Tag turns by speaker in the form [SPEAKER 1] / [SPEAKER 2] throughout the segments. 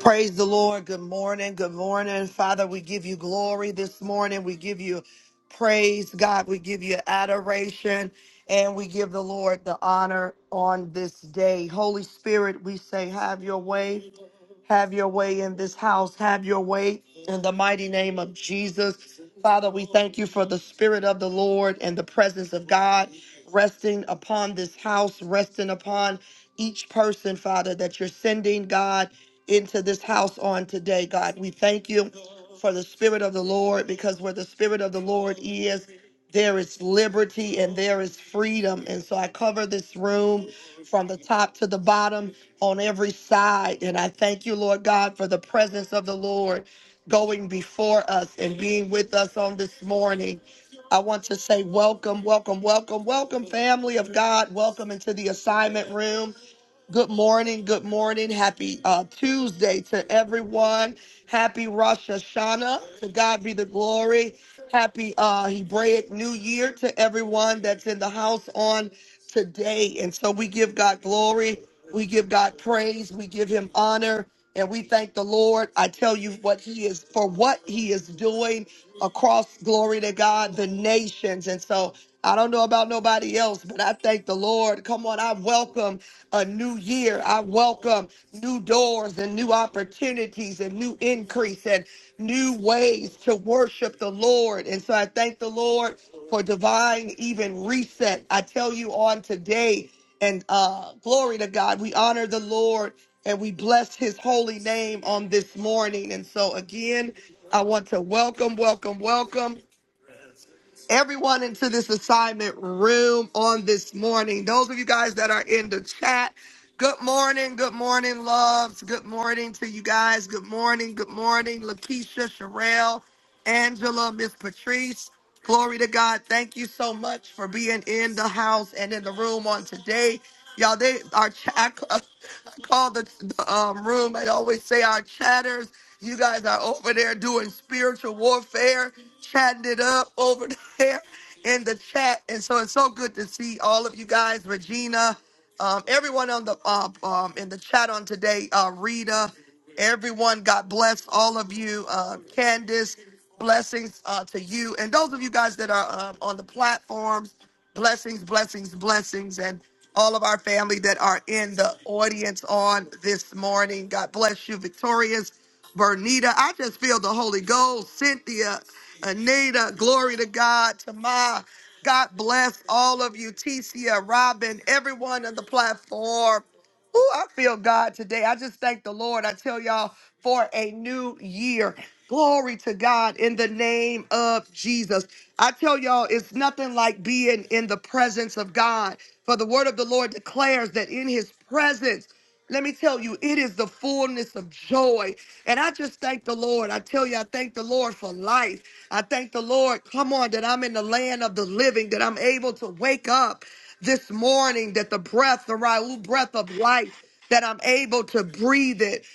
[SPEAKER 1] Praise the Lord. Good morning. Good morning. Father, we give you glory this morning. We give you praise, God. We give you adoration and we give the Lord the honor on this day. Holy Spirit, we say, have your way. Have your way in this house. Have your way in the mighty name of Jesus. Father, we thank you for the Spirit of the Lord and the presence of God resting upon this house, resting upon each person, Father, that you're sending, God into this house on today, God. We thank you for the Spirit of the Lord because where the Spirit of the Lord is, there is liberty and there is freedom. And so I cover this room from the top to the bottom on every side. And I thank you, Lord God, for the presence of the Lord going before us and being with us on this morning. I want to say welcome, welcome, welcome, welcome, family of God. Welcome into the assignment room. Good morning, good morning. Happy uh, Tuesday to everyone. Happy Rosh Hashanah. To God be the glory. Happy uh, Hebraic New Year to everyone that's in the house on today. And so we give God glory, we give God praise, we give Him honor, and we thank the Lord. I tell you what He is for what He is doing across glory to God, the nations. And so I don't know about nobody else, but I thank the Lord. Come on, I welcome a new year. I welcome new doors and new opportunities and new increase and new ways to worship the Lord. And so I thank the Lord for divine even reset. I tell you on today, and uh, glory to God, we honor the Lord and we bless his holy name on this morning. And so again, I want to welcome, welcome, welcome everyone into this assignment room on this morning. Those of you guys that are in the chat, good morning, good morning, loves. Good morning to you guys. Good morning, good morning, Lakeisha, Sherelle, Angela, Miss Patrice. Glory to God. Thank you so much for being in the house and in the room on today. Y'all, they our chat. I ca- I call the, the um, room. I always say our chatters. You guys are over there doing spiritual warfare, chatting it up over there in the chat. And so it's so good to see all of you guys, Regina, um, everyone on the uh, um, in the chat on today, uh, Rita. Everyone, God bless all of you. Uh, Candace, blessings uh, to you. And those of you guys that are um, on the platforms, blessings, blessings, blessings. And all of our family that are in the audience on this morning. God bless you, Victorious. Bernita, I just feel the Holy Ghost. Cynthia, Anita, glory to God. Tamar, God bless all of you. Ticia, Robin, everyone on the platform. Ooh, I feel God today. I just thank the Lord. I tell y'all for a new year. Glory to God in the name of Jesus. I tell y'all, it's nothing like being in the presence of God. For the word of the Lord declares that in his presence let me tell you, it is the fullness of joy. And I just thank the Lord. I tell you, I thank the Lord for life. I thank the Lord, come on, that I'm in the land of the living, that I'm able to wake up this morning, that the breath, the Raul breath of life, that I'm able to breathe it.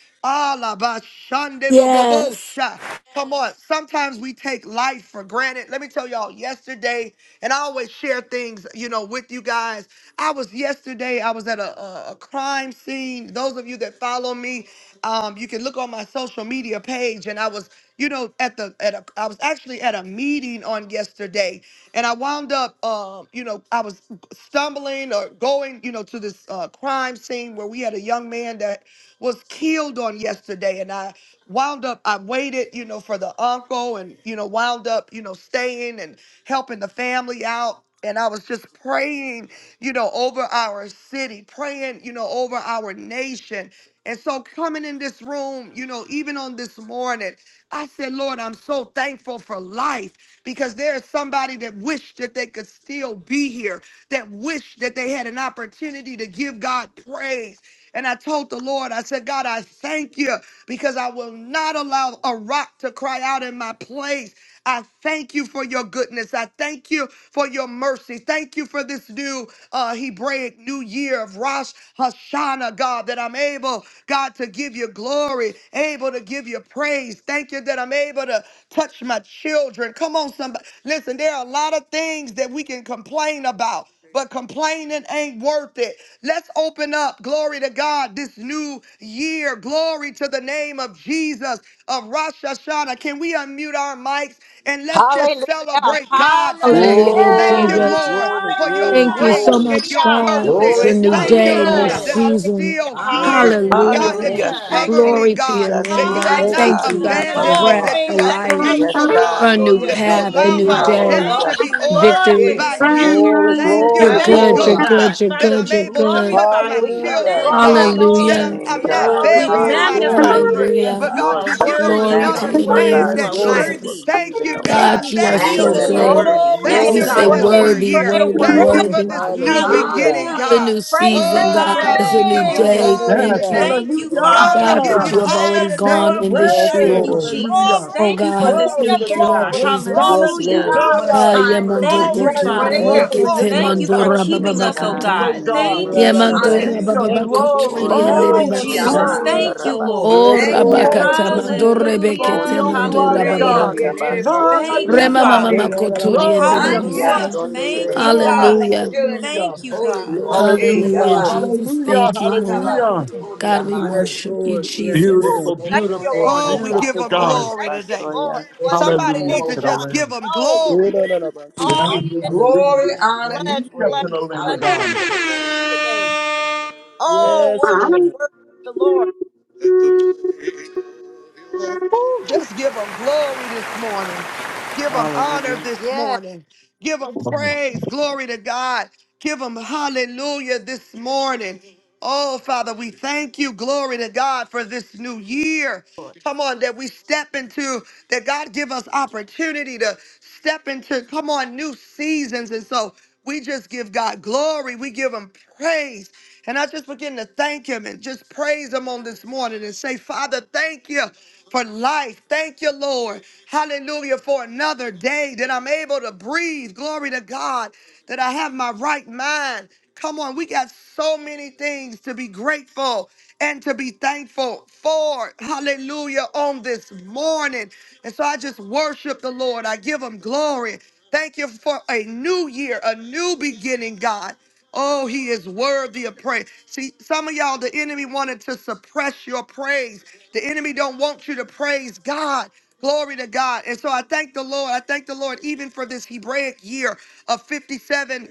[SPEAKER 2] Yes.
[SPEAKER 1] Alabashandelobobosha. Come on. Sometimes we take life for granted. Let me tell y'all, yesterday, and I always share things, you know, with you guys. I was yesterday, I was at a, a, a crime scene. Those of you that follow me, um, you can look on my social media page. And I was, you know, at the at a I was actually at a meeting on yesterday, and I wound up um, you know, I was stumbling or going, you know, to this uh crime scene where we had a young man that was killed on yesterday yesterday and I wound up, I waited, you know, for the uncle and, you know, wound up, you know, staying and helping the family out. And I was just praying, you know, over our city, praying, you know, over our nation. And so coming in this room, you know, even on this morning, I said, Lord, I'm so thankful for life because there's somebody that wished that they could still be here, that wished that they had an opportunity to give God praise. And I told the Lord, I said, God, I thank you because I will not allow a rock to cry out in my place. I thank you for your goodness. I thank you for your mercy. Thank you for this new uh, Hebraic New Year of Rosh Hashanah, God, that I'm able, God, to give you glory, able to give you praise. Thank you that I'm able to touch my children. Come on, somebody. Listen, there are a lot of things that we can complain about but complaining ain't worth it. Let's open up, glory to God, this new year. Glory to the name of Jesus of Rosh Hashanah. Can we unmute our mics and let's just
[SPEAKER 3] Hallelujah.
[SPEAKER 1] celebrate God today?
[SPEAKER 2] Hallelujah,
[SPEAKER 4] Hallelujah.
[SPEAKER 1] Thank
[SPEAKER 3] Yes.
[SPEAKER 1] you,
[SPEAKER 5] Glory,
[SPEAKER 2] Jesus.
[SPEAKER 1] Lord,
[SPEAKER 5] glory,
[SPEAKER 1] for your
[SPEAKER 5] glory,
[SPEAKER 3] Hallelujah.
[SPEAKER 2] Thank you so
[SPEAKER 1] grace
[SPEAKER 5] glory.
[SPEAKER 1] and
[SPEAKER 2] much,
[SPEAKER 1] your
[SPEAKER 3] Hallelujah.
[SPEAKER 2] God.
[SPEAKER 4] Thank
[SPEAKER 1] mercy.
[SPEAKER 2] It's
[SPEAKER 4] you,
[SPEAKER 2] a
[SPEAKER 6] Glory.
[SPEAKER 5] Yes,
[SPEAKER 2] new
[SPEAKER 3] Thank
[SPEAKER 5] Lord.
[SPEAKER 1] Thank
[SPEAKER 3] you,
[SPEAKER 1] you,
[SPEAKER 2] day,
[SPEAKER 5] Yes,
[SPEAKER 2] new
[SPEAKER 3] Lord.
[SPEAKER 1] Lord,
[SPEAKER 6] Hallelujah.
[SPEAKER 5] Lord.
[SPEAKER 1] that I'm
[SPEAKER 4] Jesus.
[SPEAKER 2] season.
[SPEAKER 3] Hallelujah.
[SPEAKER 1] still
[SPEAKER 5] Thank
[SPEAKER 6] My
[SPEAKER 5] you,
[SPEAKER 1] here.
[SPEAKER 6] God,
[SPEAKER 3] Hallelujah.
[SPEAKER 5] Jesus.
[SPEAKER 6] my
[SPEAKER 1] God,
[SPEAKER 2] Hallelujah.
[SPEAKER 1] that
[SPEAKER 6] God.
[SPEAKER 5] Thank
[SPEAKER 1] you
[SPEAKER 7] Hallelujah.
[SPEAKER 5] you,
[SPEAKER 4] Hallelujah.
[SPEAKER 5] Jesus.
[SPEAKER 6] Thank
[SPEAKER 1] cover
[SPEAKER 6] you.
[SPEAKER 7] Thank
[SPEAKER 1] me,
[SPEAKER 2] Glory
[SPEAKER 7] you,
[SPEAKER 2] to
[SPEAKER 1] God,
[SPEAKER 2] your
[SPEAKER 7] Jesus.
[SPEAKER 1] that
[SPEAKER 2] name,
[SPEAKER 1] you
[SPEAKER 7] Glory
[SPEAKER 1] have
[SPEAKER 2] God.
[SPEAKER 6] Thank
[SPEAKER 7] to
[SPEAKER 5] Thank
[SPEAKER 6] you
[SPEAKER 5] you,
[SPEAKER 1] not
[SPEAKER 2] Thank
[SPEAKER 6] for
[SPEAKER 7] God.
[SPEAKER 2] you,
[SPEAKER 6] the
[SPEAKER 2] God,
[SPEAKER 5] Jesus.
[SPEAKER 2] for
[SPEAKER 6] community
[SPEAKER 1] abandoned
[SPEAKER 6] of
[SPEAKER 1] me,
[SPEAKER 4] Hallelujah.
[SPEAKER 2] breath,
[SPEAKER 6] God.
[SPEAKER 1] that
[SPEAKER 2] for
[SPEAKER 1] you
[SPEAKER 3] Glory.
[SPEAKER 1] are
[SPEAKER 3] Thank
[SPEAKER 8] Yes,
[SPEAKER 6] Thank
[SPEAKER 2] life,
[SPEAKER 6] you.
[SPEAKER 3] you, Lord,
[SPEAKER 7] Yes,
[SPEAKER 1] faithful,
[SPEAKER 3] for the
[SPEAKER 2] for
[SPEAKER 1] God
[SPEAKER 7] God.
[SPEAKER 2] a
[SPEAKER 3] new
[SPEAKER 7] Lord,
[SPEAKER 2] new
[SPEAKER 7] we
[SPEAKER 3] year.
[SPEAKER 6] Mm.
[SPEAKER 1] that
[SPEAKER 3] Thank
[SPEAKER 1] you
[SPEAKER 7] thank
[SPEAKER 2] path, a
[SPEAKER 5] Thank
[SPEAKER 1] allowed
[SPEAKER 7] you.
[SPEAKER 2] new
[SPEAKER 5] you,
[SPEAKER 4] Glory.
[SPEAKER 3] you,
[SPEAKER 1] my
[SPEAKER 6] My
[SPEAKER 2] day.
[SPEAKER 3] Lord.
[SPEAKER 5] Lord.
[SPEAKER 1] steps
[SPEAKER 6] God,
[SPEAKER 1] to
[SPEAKER 4] Thank
[SPEAKER 7] Hallelujah.
[SPEAKER 1] be
[SPEAKER 6] my
[SPEAKER 4] you,
[SPEAKER 6] God.
[SPEAKER 1] ordered
[SPEAKER 3] Hallelujah.
[SPEAKER 4] Lord,
[SPEAKER 2] Victory,
[SPEAKER 4] for
[SPEAKER 6] Hey,
[SPEAKER 1] by
[SPEAKER 4] this new
[SPEAKER 1] you.
[SPEAKER 4] year,
[SPEAKER 3] Hallelujah.
[SPEAKER 5] Glory,
[SPEAKER 1] Thank you,
[SPEAKER 2] you're
[SPEAKER 4] Jesus.
[SPEAKER 5] glory,
[SPEAKER 1] Holy
[SPEAKER 4] Thank
[SPEAKER 6] Uncle,
[SPEAKER 2] good,
[SPEAKER 4] you,
[SPEAKER 5] glory.
[SPEAKER 2] you're
[SPEAKER 6] uh,
[SPEAKER 1] Ghost, uh,
[SPEAKER 2] good,
[SPEAKER 4] God.
[SPEAKER 2] you're
[SPEAKER 1] that
[SPEAKER 4] Father,
[SPEAKER 2] good,
[SPEAKER 1] I'm
[SPEAKER 4] we
[SPEAKER 2] you're
[SPEAKER 1] able to
[SPEAKER 2] good.
[SPEAKER 1] touch
[SPEAKER 4] glorify
[SPEAKER 1] my
[SPEAKER 3] We give
[SPEAKER 4] you.
[SPEAKER 3] you
[SPEAKER 5] Hallelujah.
[SPEAKER 1] children,
[SPEAKER 4] Thank
[SPEAKER 6] Uncle
[SPEAKER 4] you,
[SPEAKER 3] glory,
[SPEAKER 1] God,
[SPEAKER 7] Glory to
[SPEAKER 3] Lord.
[SPEAKER 6] is
[SPEAKER 1] that
[SPEAKER 7] your
[SPEAKER 3] We
[SPEAKER 2] Hallelujah.
[SPEAKER 1] I'm,
[SPEAKER 4] Jesus.
[SPEAKER 3] give
[SPEAKER 7] name,
[SPEAKER 1] I'm
[SPEAKER 6] being
[SPEAKER 3] you
[SPEAKER 7] God.
[SPEAKER 1] not
[SPEAKER 6] uh,
[SPEAKER 5] Glory,
[SPEAKER 4] We
[SPEAKER 3] glory
[SPEAKER 1] burying
[SPEAKER 5] glory,
[SPEAKER 3] and
[SPEAKER 1] my
[SPEAKER 3] honor.
[SPEAKER 4] magnify
[SPEAKER 7] Hallelujah.
[SPEAKER 5] glory.
[SPEAKER 4] your
[SPEAKER 1] children,
[SPEAKER 4] name.
[SPEAKER 2] Hallelujah.
[SPEAKER 1] but
[SPEAKER 4] You
[SPEAKER 6] uh,
[SPEAKER 1] God,
[SPEAKER 7] Lord,
[SPEAKER 4] are
[SPEAKER 1] you
[SPEAKER 7] touch
[SPEAKER 1] give
[SPEAKER 7] the
[SPEAKER 1] them
[SPEAKER 4] worthy.
[SPEAKER 2] Glory
[SPEAKER 4] You
[SPEAKER 2] to
[SPEAKER 6] hallelujah.
[SPEAKER 1] another
[SPEAKER 4] are
[SPEAKER 7] families,
[SPEAKER 2] your
[SPEAKER 7] oh
[SPEAKER 2] name,
[SPEAKER 4] worthy.
[SPEAKER 7] God,
[SPEAKER 1] chance
[SPEAKER 4] You
[SPEAKER 5] Yes,
[SPEAKER 7] of
[SPEAKER 2] Lord
[SPEAKER 4] are
[SPEAKER 1] at life.
[SPEAKER 7] those
[SPEAKER 5] Lord.
[SPEAKER 7] who are
[SPEAKER 2] Jesus.
[SPEAKER 4] worthy.
[SPEAKER 1] Thank
[SPEAKER 7] grieving,
[SPEAKER 1] you,
[SPEAKER 7] oh
[SPEAKER 4] Thank
[SPEAKER 1] God.
[SPEAKER 7] God.
[SPEAKER 2] God,
[SPEAKER 4] you,
[SPEAKER 2] you are
[SPEAKER 1] Thank you,
[SPEAKER 2] so
[SPEAKER 7] In the
[SPEAKER 4] Jesus. You're
[SPEAKER 1] Lord.
[SPEAKER 2] good.
[SPEAKER 7] name of
[SPEAKER 5] Udalabasha.
[SPEAKER 4] worthy.
[SPEAKER 3] Oh, we
[SPEAKER 1] Thank
[SPEAKER 3] give
[SPEAKER 4] Yes,
[SPEAKER 2] We
[SPEAKER 6] Thank
[SPEAKER 1] you
[SPEAKER 5] Glory,
[SPEAKER 6] you,
[SPEAKER 7] Jesus.
[SPEAKER 1] for
[SPEAKER 2] say,
[SPEAKER 3] you
[SPEAKER 4] God,
[SPEAKER 6] Lord.
[SPEAKER 4] you're
[SPEAKER 1] this
[SPEAKER 3] praise,
[SPEAKER 5] glory.
[SPEAKER 1] new
[SPEAKER 2] worthy,
[SPEAKER 4] worthy.
[SPEAKER 1] year.
[SPEAKER 3] praise,
[SPEAKER 4] You're
[SPEAKER 6] We
[SPEAKER 2] worthy,
[SPEAKER 1] Thank you
[SPEAKER 3] praise,
[SPEAKER 4] worthy.
[SPEAKER 1] for
[SPEAKER 2] worthy.
[SPEAKER 6] glorify
[SPEAKER 1] this
[SPEAKER 6] you. We
[SPEAKER 1] new
[SPEAKER 6] honor
[SPEAKER 5] Hallelujah.
[SPEAKER 1] beginning,
[SPEAKER 6] you.
[SPEAKER 2] the
[SPEAKER 1] God.
[SPEAKER 2] new
[SPEAKER 4] Hallelujah.
[SPEAKER 3] praise,
[SPEAKER 2] season,
[SPEAKER 3] praise,
[SPEAKER 1] Oh,
[SPEAKER 2] God.
[SPEAKER 6] Mm.
[SPEAKER 1] Father,
[SPEAKER 2] It's a
[SPEAKER 1] we
[SPEAKER 2] new
[SPEAKER 1] give you
[SPEAKER 3] praise.
[SPEAKER 2] day.
[SPEAKER 4] Hallelujah.
[SPEAKER 1] glory
[SPEAKER 2] Thank
[SPEAKER 5] Hallelujah.
[SPEAKER 2] you,
[SPEAKER 1] today.
[SPEAKER 4] Thank you,
[SPEAKER 1] God,
[SPEAKER 6] Rosh
[SPEAKER 1] we
[SPEAKER 4] Father.
[SPEAKER 2] God,
[SPEAKER 1] give
[SPEAKER 2] that
[SPEAKER 8] hallelujah!
[SPEAKER 1] you
[SPEAKER 2] you have
[SPEAKER 6] Hashanah.
[SPEAKER 1] honor
[SPEAKER 2] already
[SPEAKER 4] Yes,
[SPEAKER 1] today.
[SPEAKER 2] gone
[SPEAKER 4] Lord,
[SPEAKER 2] in
[SPEAKER 4] we
[SPEAKER 2] this
[SPEAKER 5] Yes,
[SPEAKER 4] thank
[SPEAKER 8] Yahweh,
[SPEAKER 2] year.
[SPEAKER 4] you,
[SPEAKER 5] Lord.
[SPEAKER 4] Jesus.
[SPEAKER 8] hallelujah!
[SPEAKER 3] Glory
[SPEAKER 2] Oh,
[SPEAKER 4] Thank you
[SPEAKER 3] to
[SPEAKER 4] for
[SPEAKER 3] the
[SPEAKER 2] God.
[SPEAKER 4] this
[SPEAKER 3] King
[SPEAKER 4] new
[SPEAKER 8] Glory
[SPEAKER 3] of
[SPEAKER 8] to
[SPEAKER 2] Thank
[SPEAKER 4] year,
[SPEAKER 2] you, Lord
[SPEAKER 8] God!
[SPEAKER 4] God.
[SPEAKER 3] glory.
[SPEAKER 2] Jesus.
[SPEAKER 8] Hosanna,
[SPEAKER 3] Glory
[SPEAKER 5] Yes,
[SPEAKER 3] to
[SPEAKER 4] Hallelujah.
[SPEAKER 5] Lord.
[SPEAKER 3] God.
[SPEAKER 6] What
[SPEAKER 3] We
[SPEAKER 6] a
[SPEAKER 2] Ah,
[SPEAKER 8] Jesus!
[SPEAKER 3] give you
[SPEAKER 6] time of
[SPEAKER 2] yamando
[SPEAKER 4] Thank
[SPEAKER 6] blessing
[SPEAKER 4] you,
[SPEAKER 3] glory,
[SPEAKER 6] and
[SPEAKER 8] life,
[SPEAKER 3] glory,
[SPEAKER 2] kotura
[SPEAKER 4] Father.
[SPEAKER 5] Thank
[SPEAKER 6] prayer.
[SPEAKER 5] you,
[SPEAKER 8] glory,
[SPEAKER 3] glory.
[SPEAKER 2] bekete
[SPEAKER 4] Thank you for
[SPEAKER 5] Jesus.
[SPEAKER 2] mandora
[SPEAKER 8] immortality,
[SPEAKER 4] keeping
[SPEAKER 7] Yes,
[SPEAKER 4] us, oh
[SPEAKER 2] bababakata.
[SPEAKER 8] substance,
[SPEAKER 7] God.
[SPEAKER 8] O
[SPEAKER 4] God.
[SPEAKER 7] In the
[SPEAKER 8] God.
[SPEAKER 7] name
[SPEAKER 4] Thank
[SPEAKER 7] of
[SPEAKER 4] you,
[SPEAKER 8] The
[SPEAKER 5] Udalabasha.
[SPEAKER 2] Yamandora
[SPEAKER 8] King
[SPEAKER 7] Jesus.
[SPEAKER 4] Jesus.
[SPEAKER 8] of
[SPEAKER 6] Hallelujah.
[SPEAKER 5] Thank you,
[SPEAKER 8] glory,
[SPEAKER 7] Oh,
[SPEAKER 2] bababakoturi
[SPEAKER 5] Jesus.
[SPEAKER 7] yeah,
[SPEAKER 1] Oh,
[SPEAKER 4] Thank
[SPEAKER 8] now
[SPEAKER 2] endele
[SPEAKER 4] you,
[SPEAKER 7] baso,
[SPEAKER 8] unto the
[SPEAKER 7] yeah,
[SPEAKER 1] glory.
[SPEAKER 4] Jesus.
[SPEAKER 6] Moshiyama.
[SPEAKER 7] ando,
[SPEAKER 8] King
[SPEAKER 7] yeah,
[SPEAKER 4] Thank you,
[SPEAKER 8] eternal,
[SPEAKER 7] rabasa.
[SPEAKER 4] Lord.
[SPEAKER 2] Oh,
[SPEAKER 5] Yes,
[SPEAKER 6] Thank you.
[SPEAKER 3] Glory,
[SPEAKER 5] Lord.
[SPEAKER 2] rabakata
[SPEAKER 8] immortal,
[SPEAKER 5] Yes,
[SPEAKER 2] mandore
[SPEAKER 5] Lord.
[SPEAKER 8] invincible,
[SPEAKER 2] bekete
[SPEAKER 4] Hallelujah.
[SPEAKER 8] the
[SPEAKER 7] Ondi,
[SPEAKER 8] only wise
[SPEAKER 7] endi,
[SPEAKER 2] mandora
[SPEAKER 6] Praise
[SPEAKER 7] ando,
[SPEAKER 8] God.
[SPEAKER 4] Hallelujah.
[SPEAKER 7] yeah,
[SPEAKER 6] you,
[SPEAKER 2] bababakata.
[SPEAKER 6] Lady
[SPEAKER 7] basete,
[SPEAKER 4] Thank
[SPEAKER 6] Bakuti.
[SPEAKER 7] yeah,
[SPEAKER 4] you,
[SPEAKER 6] I'm
[SPEAKER 2] Rema mama
[SPEAKER 8] Hallelujah.
[SPEAKER 6] under.
[SPEAKER 7] yaso.
[SPEAKER 4] Father.
[SPEAKER 2] makoturi
[SPEAKER 8] Glory
[SPEAKER 2] endele
[SPEAKER 6] Thank
[SPEAKER 8] and
[SPEAKER 7] Only
[SPEAKER 6] you.
[SPEAKER 7] a
[SPEAKER 4] Hallelujah.
[SPEAKER 8] blessing
[SPEAKER 7] Sunday
[SPEAKER 8] to
[SPEAKER 4] Thank you,
[SPEAKER 7] here,
[SPEAKER 8] God.
[SPEAKER 4] God.
[SPEAKER 2] Hallelujah.
[SPEAKER 7] Basso.
[SPEAKER 6] Filling them with
[SPEAKER 8] Hallelujah.
[SPEAKER 6] the
[SPEAKER 4] Thank you,
[SPEAKER 6] Holy
[SPEAKER 4] God.
[SPEAKER 6] Ghost.
[SPEAKER 3] glory,
[SPEAKER 5] Glory,
[SPEAKER 6] Hey,
[SPEAKER 2] Hallelujah,
[SPEAKER 8] Hallelujah.
[SPEAKER 6] Yaba.
[SPEAKER 5] glory.
[SPEAKER 2] Jesus.
[SPEAKER 8] Hallelujah.
[SPEAKER 2] Thank you, Lord.
[SPEAKER 3] glory,
[SPEAKER 6] Anaba
[SPEAKER 8] Hallelujah.
[SPEAKER 3] glory.
[SPEAKER 6] Sukuri
[SPEAKER 2] God, we
[SPEAKER 5] Yes,
[SPEAKER 6] Amande.
[SPEAKER 2] worship you,
[SPEAKER 5] Lord. Yes,
[SPEAKER 2] Jesus.
[SPEAKER 3] Ooh,
[SPEAKER 8] Beautiful,
[SPEAKER 5] Lord.
[SPEAKER 6] Bless
[SPEAKER 3] thank
[SPEAKER 6] your
[SPEAKER 3] you,
[SPEAKER 8] beautiful,
[SPEAKER 3] Lord.
[SPEAKER 6] name, O
[SPEAKER 1] Oh, we
[SPEAKER 3] Thank
[SPEAKER 6] God.
[SPEAKER 1] give
[SPEAKER 3] you,
[SPEAKER 8] beautiful
[SPEAKER 1] them
[SPEAKER 7] Oh,
[SPEAKER 3] Lord.
[SPEAKER 7] yeah,
[SPEAKER 8] God.
[SPEAKER 1] glory
[SPEAKER 3] Thank you,
[SPEAKER 1] today.
[SPEAKER 3] Lord.
[SPEAKER 7] Basso,
[SPEAKER 3] Bless
[SPEAKER 6] Bless your
[SPEAKER 3] the
[SPEAKER 1] Somebody
[SPEAKER 8] Hallelujah
[SPEAKER 6] name,
[SPEAKER 3] Lord,
[SPEAKER 1] needs
[SPEAKER 6] O
[SPEAKER 1] to
[SPEAKER 8] to the
[SPEAKER 3] my
[SPEAKER 6] God.
[SPEAKER 1] just give
[SPEAKER 8] Lamb.
[SPEAKER 1] them
[SPEAKER 3] soul.
[SPEAKER 1] glory.
[SPEAKER 6] We
[SPEAKER 8] Yes.
[SPEAKER 3] All
[SPEAKER 6] give you
[SPEAKER 3] is
[SPEAKER 6] glory,
[SPEAKER 8] Hallelujah.
[SPEAKER 6] honor, and
[SPEAKER 3] blessed,
[SPEAKER 8] Hallelujah to
[SPEAKER 3] blessed,
[SPEAKER 8] the
[SPEAKER 6] praise.
[SPEAKER 8] Lamb of
[SPEAKER 3] blessed
[SPEAKER 8] God.
[SPEAKER 6] Hallelujah.
[SPEAKER 3] holy name today. Oh,
[SPEAKER 5] Yes,
[SPEAKER 3] worship,
[SPEAKER 8] Hallelujah!
[SPEAKER 5] Lord.
[SPEAKER 3] worship the Lord.
[SPEAKER 1] Ooh, just give them glory this morning. Give them honor
[SPEAKER 7] Hallelujah.
[SPEAKER 1] this
[SPEAKER 3] Yes.
[SPEAKER 1] morning. Give them praise. Glory to God. Give them hallelujah this morning. Oh, Father, we thank you. Glory to God for this new year. Come on, that we step into, that God give us opportunity to step into, come on, new seasons. And so we just give God glory. We give him praise. And I just begin to thank him and just praise him on this morning and say, Father, thank you for life. Thank you, Lord. Hallelujah for another day that I'm able to breathe. Glory to God that I have my right mind. Come on, we got so many things to be grateful and to be thankful for. Hallelujah on this morning. And so I just worship the Lord. I give him glory. Thank you for a new year, a new beginning, God. Oh, he is worthy of praise. See, some of y'all, the enemy wanted to suppress your praise. The enemy don't want you to praise God. Glory to God. And so I thank the Lord. I thank the Lord even for this Hebraic year of 57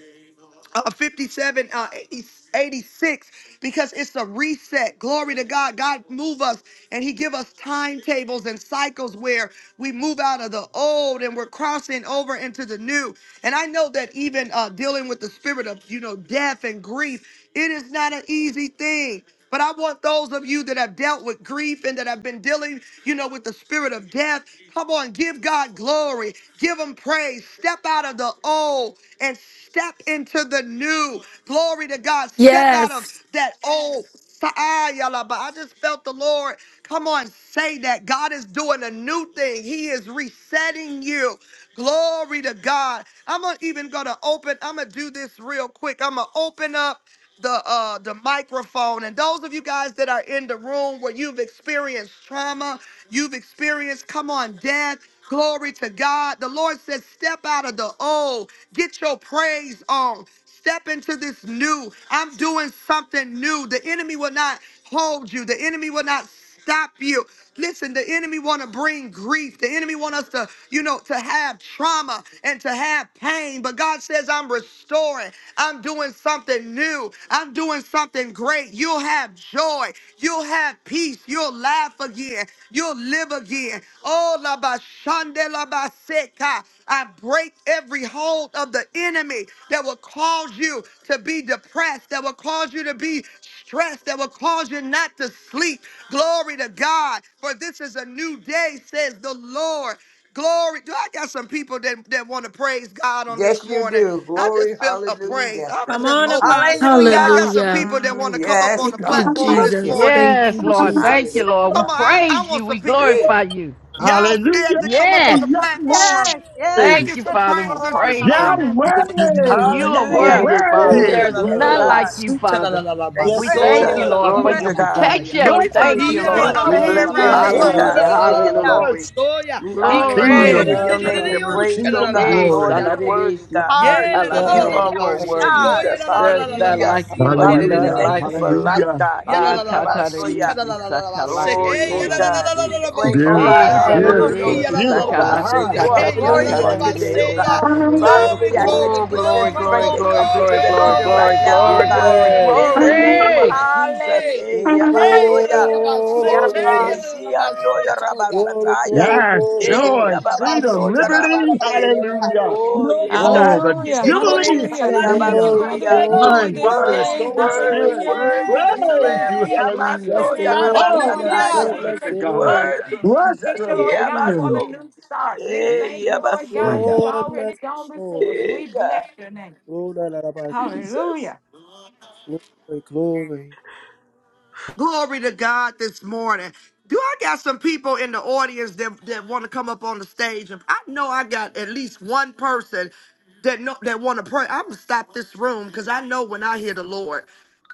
[SPEAKER 1] uh, 57, uh, 80, 86, because it's a reset. Glory to God. God move us and he give us timetables and cycles where we move out of the old and we're crossing over into the new. And I know that even uh, dealing with the spirit of, you know, death and grief, it is not an easy thing. But I want those of you that have dealt with grief and that have been dealing, you know, with the spirit of death, come on, give God glory, give Him praise, step out of the old and step into the new. Glory to God, step out of
[SPEAKER 2] Yes.
[SPEAKER 1] that old. Ah, I just felt the Lord. Come on, say that God is doing a new thing. He is resetting you. Glory to God. I'm going even gonna open. I'm gonna do this real quick. I'm gonna open up the uh the microphone and those of you guys that are in the room where you've experienced trauma you've experienced come on death glory to god the lord says step out of the old get your praise on step into this new i'm doing something new the enemy will not hold you the enemy will not stop you. Listen, the enemy want to bring grief. The enemy want us to, you know, to have trauma and to have pain. But God says, I'm restoring. I'm doing something new. I'm doing something great. You'll have joy. You'll have peace. You'll laugh again. You'll live again. Oh, la ba shande la ba seka. I break every hold of the enemy that will cause you to be depressed, that will cause you to be stressed, that will cause you not to sleep. Glory to God, for this is a new day, says the Lord. Glory. Do I got some people that, that want to praise God on this
[SPEAKER 6] Yes, you
[SPEAKER 1] morning?
[SPEAKER 6] do.
[SPEAKER 1] I
[SPEAKER 6] Glory,
[SPEAKER 1] just feel a praise.
[SPEAKER 6] hallelujah.
[SPEAKER 1] I'm going to
[SPEAKER 4] Come
[SPEAKER 6] Thank
[SPEAKER 1] just
[SPEAKER 4] on,
[SPEAKER 6] you,
[SPEAKER 1] open.
[SPEAKER 6] Jesus.
[SPEAKER 1] Do I
[SPEAKER 3] Hallelujah.
[SPEAKER 4] Apostle.
[SPEAKER 1] got some
[SPEAKER 2] Hallelujah.
[SPEAKER 1] people that want
[SPEAKER 6] Mm,
[SPEAKER 1] to come up on
[SPEAKER 6] yes,
[SPEAKER 1] the
[SPEAKER 2] Thank you,
[SPEAKER 6] God.
[SPEAKER 1] platform
[SPEAKER 6] Thank
[SPEAKER 1] this
[SPEAKER 6] you,
[SPEAKER 2] Jesus.
[SPEAKER 1] morning?
[SPEAKER 2] Thank
[SPEAKER 6] Jesus.
[SPEAKER 9] Yes,
[SPEAKER 2] you,
[SPEAKER 9] Lord. Thank you,
[SPEAKER 2] Jesus.
[SPEAKER 9] Lord. We
[SPEAKER 1] Come
[SPEAKER 6] Hallelujah.
[SPEAKER 1] on, I, I
[SPEAKER 9] praise
[SPEAKER 1] want
[SPEAKER 9] you.
[SPEAKER 1] some
[SPEAKER 9] We
[SPEAKER 1] people.
[SPEAKER 6] Hey.
[SPEAKER 9] glorify you.
[SPEAKER 1] Y'all scared to come up on
[SPEAKER 9] Yes.
[SPEAKER 1] the platform?
[SPEAKER 3] Yes,
[SPEAKER 1] Can
[SPEAKER 3] yes,
[SPEAKER 1] I
[SPEAKER 9] Thank
[SPEAKER 1] get
[SPEAKER 9] you,
[SPEAKER 3] yes,
[SPEAKER 1] some
[SPEAKER 9] Father. We
[SPEAKER 1] praisers
[SPEAKER 3] Lord.
[SPEAKER 1] this
[SPEAKER 9] praise you.
[SPEAKER 3] Hallelujah.
[SPEAKER 1] morning?
[SPEAKER 8] Yahweh! Yahweh!
[SPEAKER 9] You are
[SPEAKER 7] Hallelujah.
[SPEAKER 9] worthy,
[SPEAKER 5] Glory,
[SPEAKER 10] Yeah,
[SPEAKER 9] Father.
[SPEAKER 8] Yahweh!
[SPEAKER 5] glory,
[SPEAKER 9] There's
[SPEAKER 7] Yes,
[SPEAKER 9] none
[SPEAKER 5] glory.
[SPEAKER 7] God.
[SPEAKER 9] like you, Father.
[SPEAKER 7] Thank you,
[SPEAKER 9] We
[SPEAKER 5] Yes,
[SPEAKER 3] Pray,
[SPEAKER 9] thank you,
[SPEAKER 7] Jesus.
[SPEAKER 5] Lord.
[SPEAKER 9] Lord, for
[SPEAKER 7] Glory
[SPEAKER 3] pray,
[SPEAKER 8] Glory
[SPEAKER 9] your
[SPEAKER 7] to
[SPEAKER 8] to
[SPEAKER 7] God.
[SPEAKER 8] God!
[SPEAKER 9] protection.
[SPEAKER 1] Can
[SPEAKER 9] We
[SPEAKER 1] we
[SPEAKER 8] Glory
[SPEAKER 1] turn
[SPEAKER 9] thank
[SPEAKER 8] to
[SPEAKER 1] on
[SPEAKER 9] you,
[SPEAKER 1] this
[SPEAKER 8] God!
[SPEAKER 1] ha-
[SPEAKER 3] Lord
[SPEAKER 5] Thank
[SPEAKER 9] Lord.
[SPEAKER 1] on the
[SPEAKER 7] We
[SPEAKER 1] hand
[SPEAKER 7] bless your
[SPEAKER 8] Hallelujah!
[SPEAKER 5] you,
[SPEAKER 3] Jesus.
[SPEAKER 1] raising
[SPEAKER 7] name,
[SPEAKER 1] button?
[SPEAKER 7] God.
[SPEAKER 9] Hallelujah.
[SPEAKER 7] We
[SPEAKER 5] Jesus.
[SPEAKER 7] give you
[SPEAKER 3] Hallelujah.
[SPEAKER 9] Hallelujah.
[SPEAKER 8] Jesus!
[SPEAKER 7] glory. We
[SPEAKER 3] Thank
[SPEAKER 7] honor
[SPEAKER 3] you,
[SPEAKER 7] you
[SPEAKER 3] Lord,
[SPEAKER 5] Dear
[SPEAKER 7] and
[SPEAKER 3] for
[SPEAKER 8] Kingdom
[SPEAKER 9] Glory.
[SPEAKER 3] the
[SPEAKER 7] give
[SPEAKER 5] God,
[SPEAKER 7] your name
[SPEAKER 3] new.
[SPEAKER 5] Almighty.
[SPEAKER 7] the
[SPEAKER 8] power,
[SPEAKER 7] praise, oh
[SPEAKER 8] kingdom
[SPEAKER 7] God.
[SPEAKER 9] Eh,
[SPEAKER 7] Lord,
[SPEAKER 3] too,
[SPEAKER 8] glory.
[SPEAKER 7] you're
[SPEAKER 3] too
[SPEAKER 9] saladidi,
[SPEAKER 7] worthy,
[SPEAKER 9] si,
[SPEAKER 7] God.
[SPEAKER 3] hard.
[SPEAKER 5] Dear
[SPEAKER 7] You
[SPEAKER 3] Oh,
[SPEAKER 5] God.
[SPEAKER 9] sataladidi.
[SPEAKER 7] are
[SPEAKER 9] You
[SPEAKER 3] yes,
[SPEAKER 9] are
[SPEAKER 7] worthy,
[SPEAKER 9] worthy.
[SPEAKER 3] God.
[SPEAKER 7] Jesus.
[SPEAKER 9] There's none
[SPEAKER 7] Hallelujah.
[SPEAKER 9] like you,
[SPEAKER 7] Father,
[SPEAKER 9] Lord.
[SPEAKER 7] we
[SPEAKER 5] Hallelujah.
[SPEAKER 9] None
[SPEAKER 8] Hallelujah!
[SPEAKER 7] thank
[SPEAKER 9] like
[SPEAKER 7] you for
[SPEAKER 9] you.
[SPEAKER 7] life,
[SPEAKER 8] Hallelujah!
[SPEAKER 7] God.
[SPEAKER 9] Ah,
[SPEAKER 7] Eh, yabasoya.
[SPEAKER 9] tatarisi
[SPEAKER 7] Oh,
[SPEAKER 9] sakalate
[SPEAKER 7] yeah, God.
[SPEAKER 9] konorisi.
[SPEAKER 7] We bring, oh God,
[SPEAKER 9] Eh,
[SPEAKER 8] Beautiful,
[SPEAKER 3] Oh,
[SPEAKER 7] hallelujah,
[SPEAKER 3] glory,
[SPEAKER 8] beautiful,
[SPEAKER 7] those
[SPEAKER 5] Hallelujah.
[SPEAKER 7] to
[SPEAKER 9] saladisi
[SPEAKER 7] you, oh
[SPEAKER 8] beautiful
[SPEAKER 7] God,
[SPEAKER 9] sakalate
[SPEAKER 8] God!
[SPEAKER 10] Yadadadadabasoya.
[SPEAKER 7] who are
[SPEAKER 10] Hey,
[SPEAKER 3] glory
[SPEAKER 7] grieving
[SPEAKER 3] to
[SPEAKER 7] on
[SPEAKER 5] Hallelujah.
[SPEAKER 7] today, oh God.
[SPEAKER 10] yadadadadabaseya.
[SPEAKER 9] tatatatarisi.
[SPEAKER 3] glory,
[SPEAKER 7] Father,
[SPEAKER 5] Yes,
[SPEAKER 10] Glory,
[SPEAKER 7] we ask
[SPEAKER 5] Lord.
[SPEAKER 7] that
[SPEAKER 10] glory,
[SPEAKER 7] you
[SPEAKER 9] Oh,
[SPEAKER 7] would send
[SPEAKER 9] glory,
[SPEAKER 10] glory,
[SPEAKER 9] glory,
[SPEAKER 7] strength
[SPEAKER 3] glory,
[SPEAKER 10] glory,
[SPEAKER 7] and
[SPEAKER 9] glory,
[SPEAKER 7] comfort
[SPEAKER 10] glory.
[SPEAKER 9] glory,
[SPEAKER 7] to them
[SPEAKER 9] glory,
[SPEAKER 7] even
[SPEAKER 3] glory,
[SPEAKER 9] glory,
[SPEAKER 7] right now, oh
[SPEAKER 9] glory,
[SPEAKER 7] God.
[SPEAKER 9] glory,
[SPEAKER 3] glory.
[SPEAKER 7] In
[SPEAKER 5] Yes.
[SPEAKER 7] the name
[SPEAKER 9] glory.
[SPEAKER 7] of Jesus.
[SPEAKER 3] Hallelujah,
[SPEAKER 7] Hey,
[SPEAKER 10] Hey,
[SPEAKER 7] Yabasoya. Oh,
[SPEAKER 10] yadadadadabasete,
[SPEAKER 5] Glory.
[SPEAKER 7] yes, Yandoya
[SPEAKER 10] yadadadadabasotoya.
[SPEAKER 5] Glory, glory,
[SPEAKER 7] Rabasataya.
[SPEAKER 8] Yes,
[SPEAKER 5] glory,
[SPEAKER 10] Hallelujah,
[SPEAKER 7] Eh,
[SPEAKER 8] joy,
[SPEAKER 5] glory.
[SPEAKER 8] freedom,
[SPEAKER 10] yadadadadabasita,
[SPEAKER 7] Yababandoya
[SPEAKER 8] liberty,
[SPEAKER 5] Oh,
[SPEAKER 7] Rabase.
[SPEAKER 5] da, da,
[SPEAKER 10] yadadadadabasoya.
[SPEAKER 5] da, da.
[SPEAKER 8] hallelujah.
[SPEAKER 7] Oh, yes,
[SPEAKER 8] Oh,
[SPEAKER 7] God.
[SPEAKER 8] the
[SPEAKER 7] We give
[SPEAKER 11] Hallelujah,
[SPEAKER 10] Brokosiande,
[SPEAKER 7] you
[SPEAKER 8] jubilee,
[SPEAKER 7] praise.
[SPEAKER 11] hallelujah.
[SPEAKER 10] kobasiande.
[SPEAKER 11] Thank you
[SPEAKER 8] hallelujah.
[SPEAKER 11] for
[SPEAKER 5] Glory,
[SPEAKER 11] the
[SPEAKER 7] Yabasoya.
[SPEAKER 10] Yellow,
[SPEAKER 11] victory
[SPEAKER 8] Mind,
[SPEAKER 5] glory.
[SPEAKER 11] this
[SPEAKER 8] body,
[SPEAKER 10] yellow,
[SPEAKER 11] day.
[SPEAKER 7] Worthy,
[SPEAKER 5] Da,
[SPEAKER 8] soul,
[SPEAKER 5] da, da,
[SPEAKER 10] yellow.
[SPEAKER 7] worthy,
[SPEAKER 8] spirit,
[SPEAKER 5] da.
[SPEAKER 11] Hallelujah.
[SPEAKER 8] we
[SPEAKER 7] worthy
[SPEAKER 11] New
[SPEAKER 7] is the
[SPEAKER 8] praise
[SPEAKER 11] beginnings.
[SPEAKER 7] Lamb.
[SPEAKER 8] you,
[SPEAKER 11] We bless
[SPEAKER 8] hallelujah.
[SPEAKER 11] your
[SPEAKER 5] Bless
[SPEAKER 7] Yamando
[SPEAKER 5] the
[SPEAKER 10] Hey!
[SPEAKER 11] name
[SPEAKER 5] Lord,
[SPEAKER 11] this
[SPEAKER 5] bless
[SPEAKER 8] All that
[SPEAKER 11] morning
[SPEAKER 5] the
[SPEAKER 8] is
[SPEAKER 11] in the
[SPEAKER 7] Yarabasataya.
[SPEAKER 10] Hallelujah.
[SPEAKER 5] Lord,
[SPEAKER 8] within us,
[SPEAKER 11] name
[SPEAKER 5] bless
[SPEAKER 8] oh
[SPEAKER 5] the
[SPEAKER 11] of
[SPEAKER 8] God.
[SPEAKER 5] Lord.
[SPEAKER 7] Worthy
[SPEAKER 11] Jesus.
[SPEAKER 8] Bless
[SPEAKER 11] Thank
[SPEAKER 7] Jesus.
[SPEAKER 11] you,
[SPEAKER 8] your
[SPEAKER 11] Lord
[SPEAKER 8] holy
[SPEAKER 11] God, for the
[SPEAKER 8] name.
[SPEAKER 7] Yabaso.
[SPEAKER 11] new start. We
[SPEAKER 5] Bless
[SPEAKER 7] Hey,
[SPEAKER 11] thank you,
[SPEAKER 5] the
[SPEAKER 11] Lord
[SPEAKER 8] Yeah.
[SPEAKER 11] God,
[SPEAKER 7] Yabasoya.
[SPEAKER 11] you've
[SPEAKER 5] Lord,
[SPEAKER 11] already
[SPEAKER 5] bless
[SPEAKER 11] gone
[SPEAKER 5] the
[SPEAKER 11] before
[SPEAKER 5] Lord.
[SPEAKER 11] us.
[SPEAKER 7] Hey,
[SPEAKER 11] We
[SPEAKER 7] God.
[SPEAKER 11] bless your name.
[SPEAKER 5] Oh, da, da, da, da.
[SPEAKER 7] Jesus.
[SPEAKER 11] Hallelujah.
[SPEAKER 5] Glory, glory.
[SPEAKER 1] Glory to God this morning. Do I got some people in the audience that, that want to come up on the stage? If I know I got at least one person that know that want to pray. I'm gonna stop this room because I know when I hear the Lord.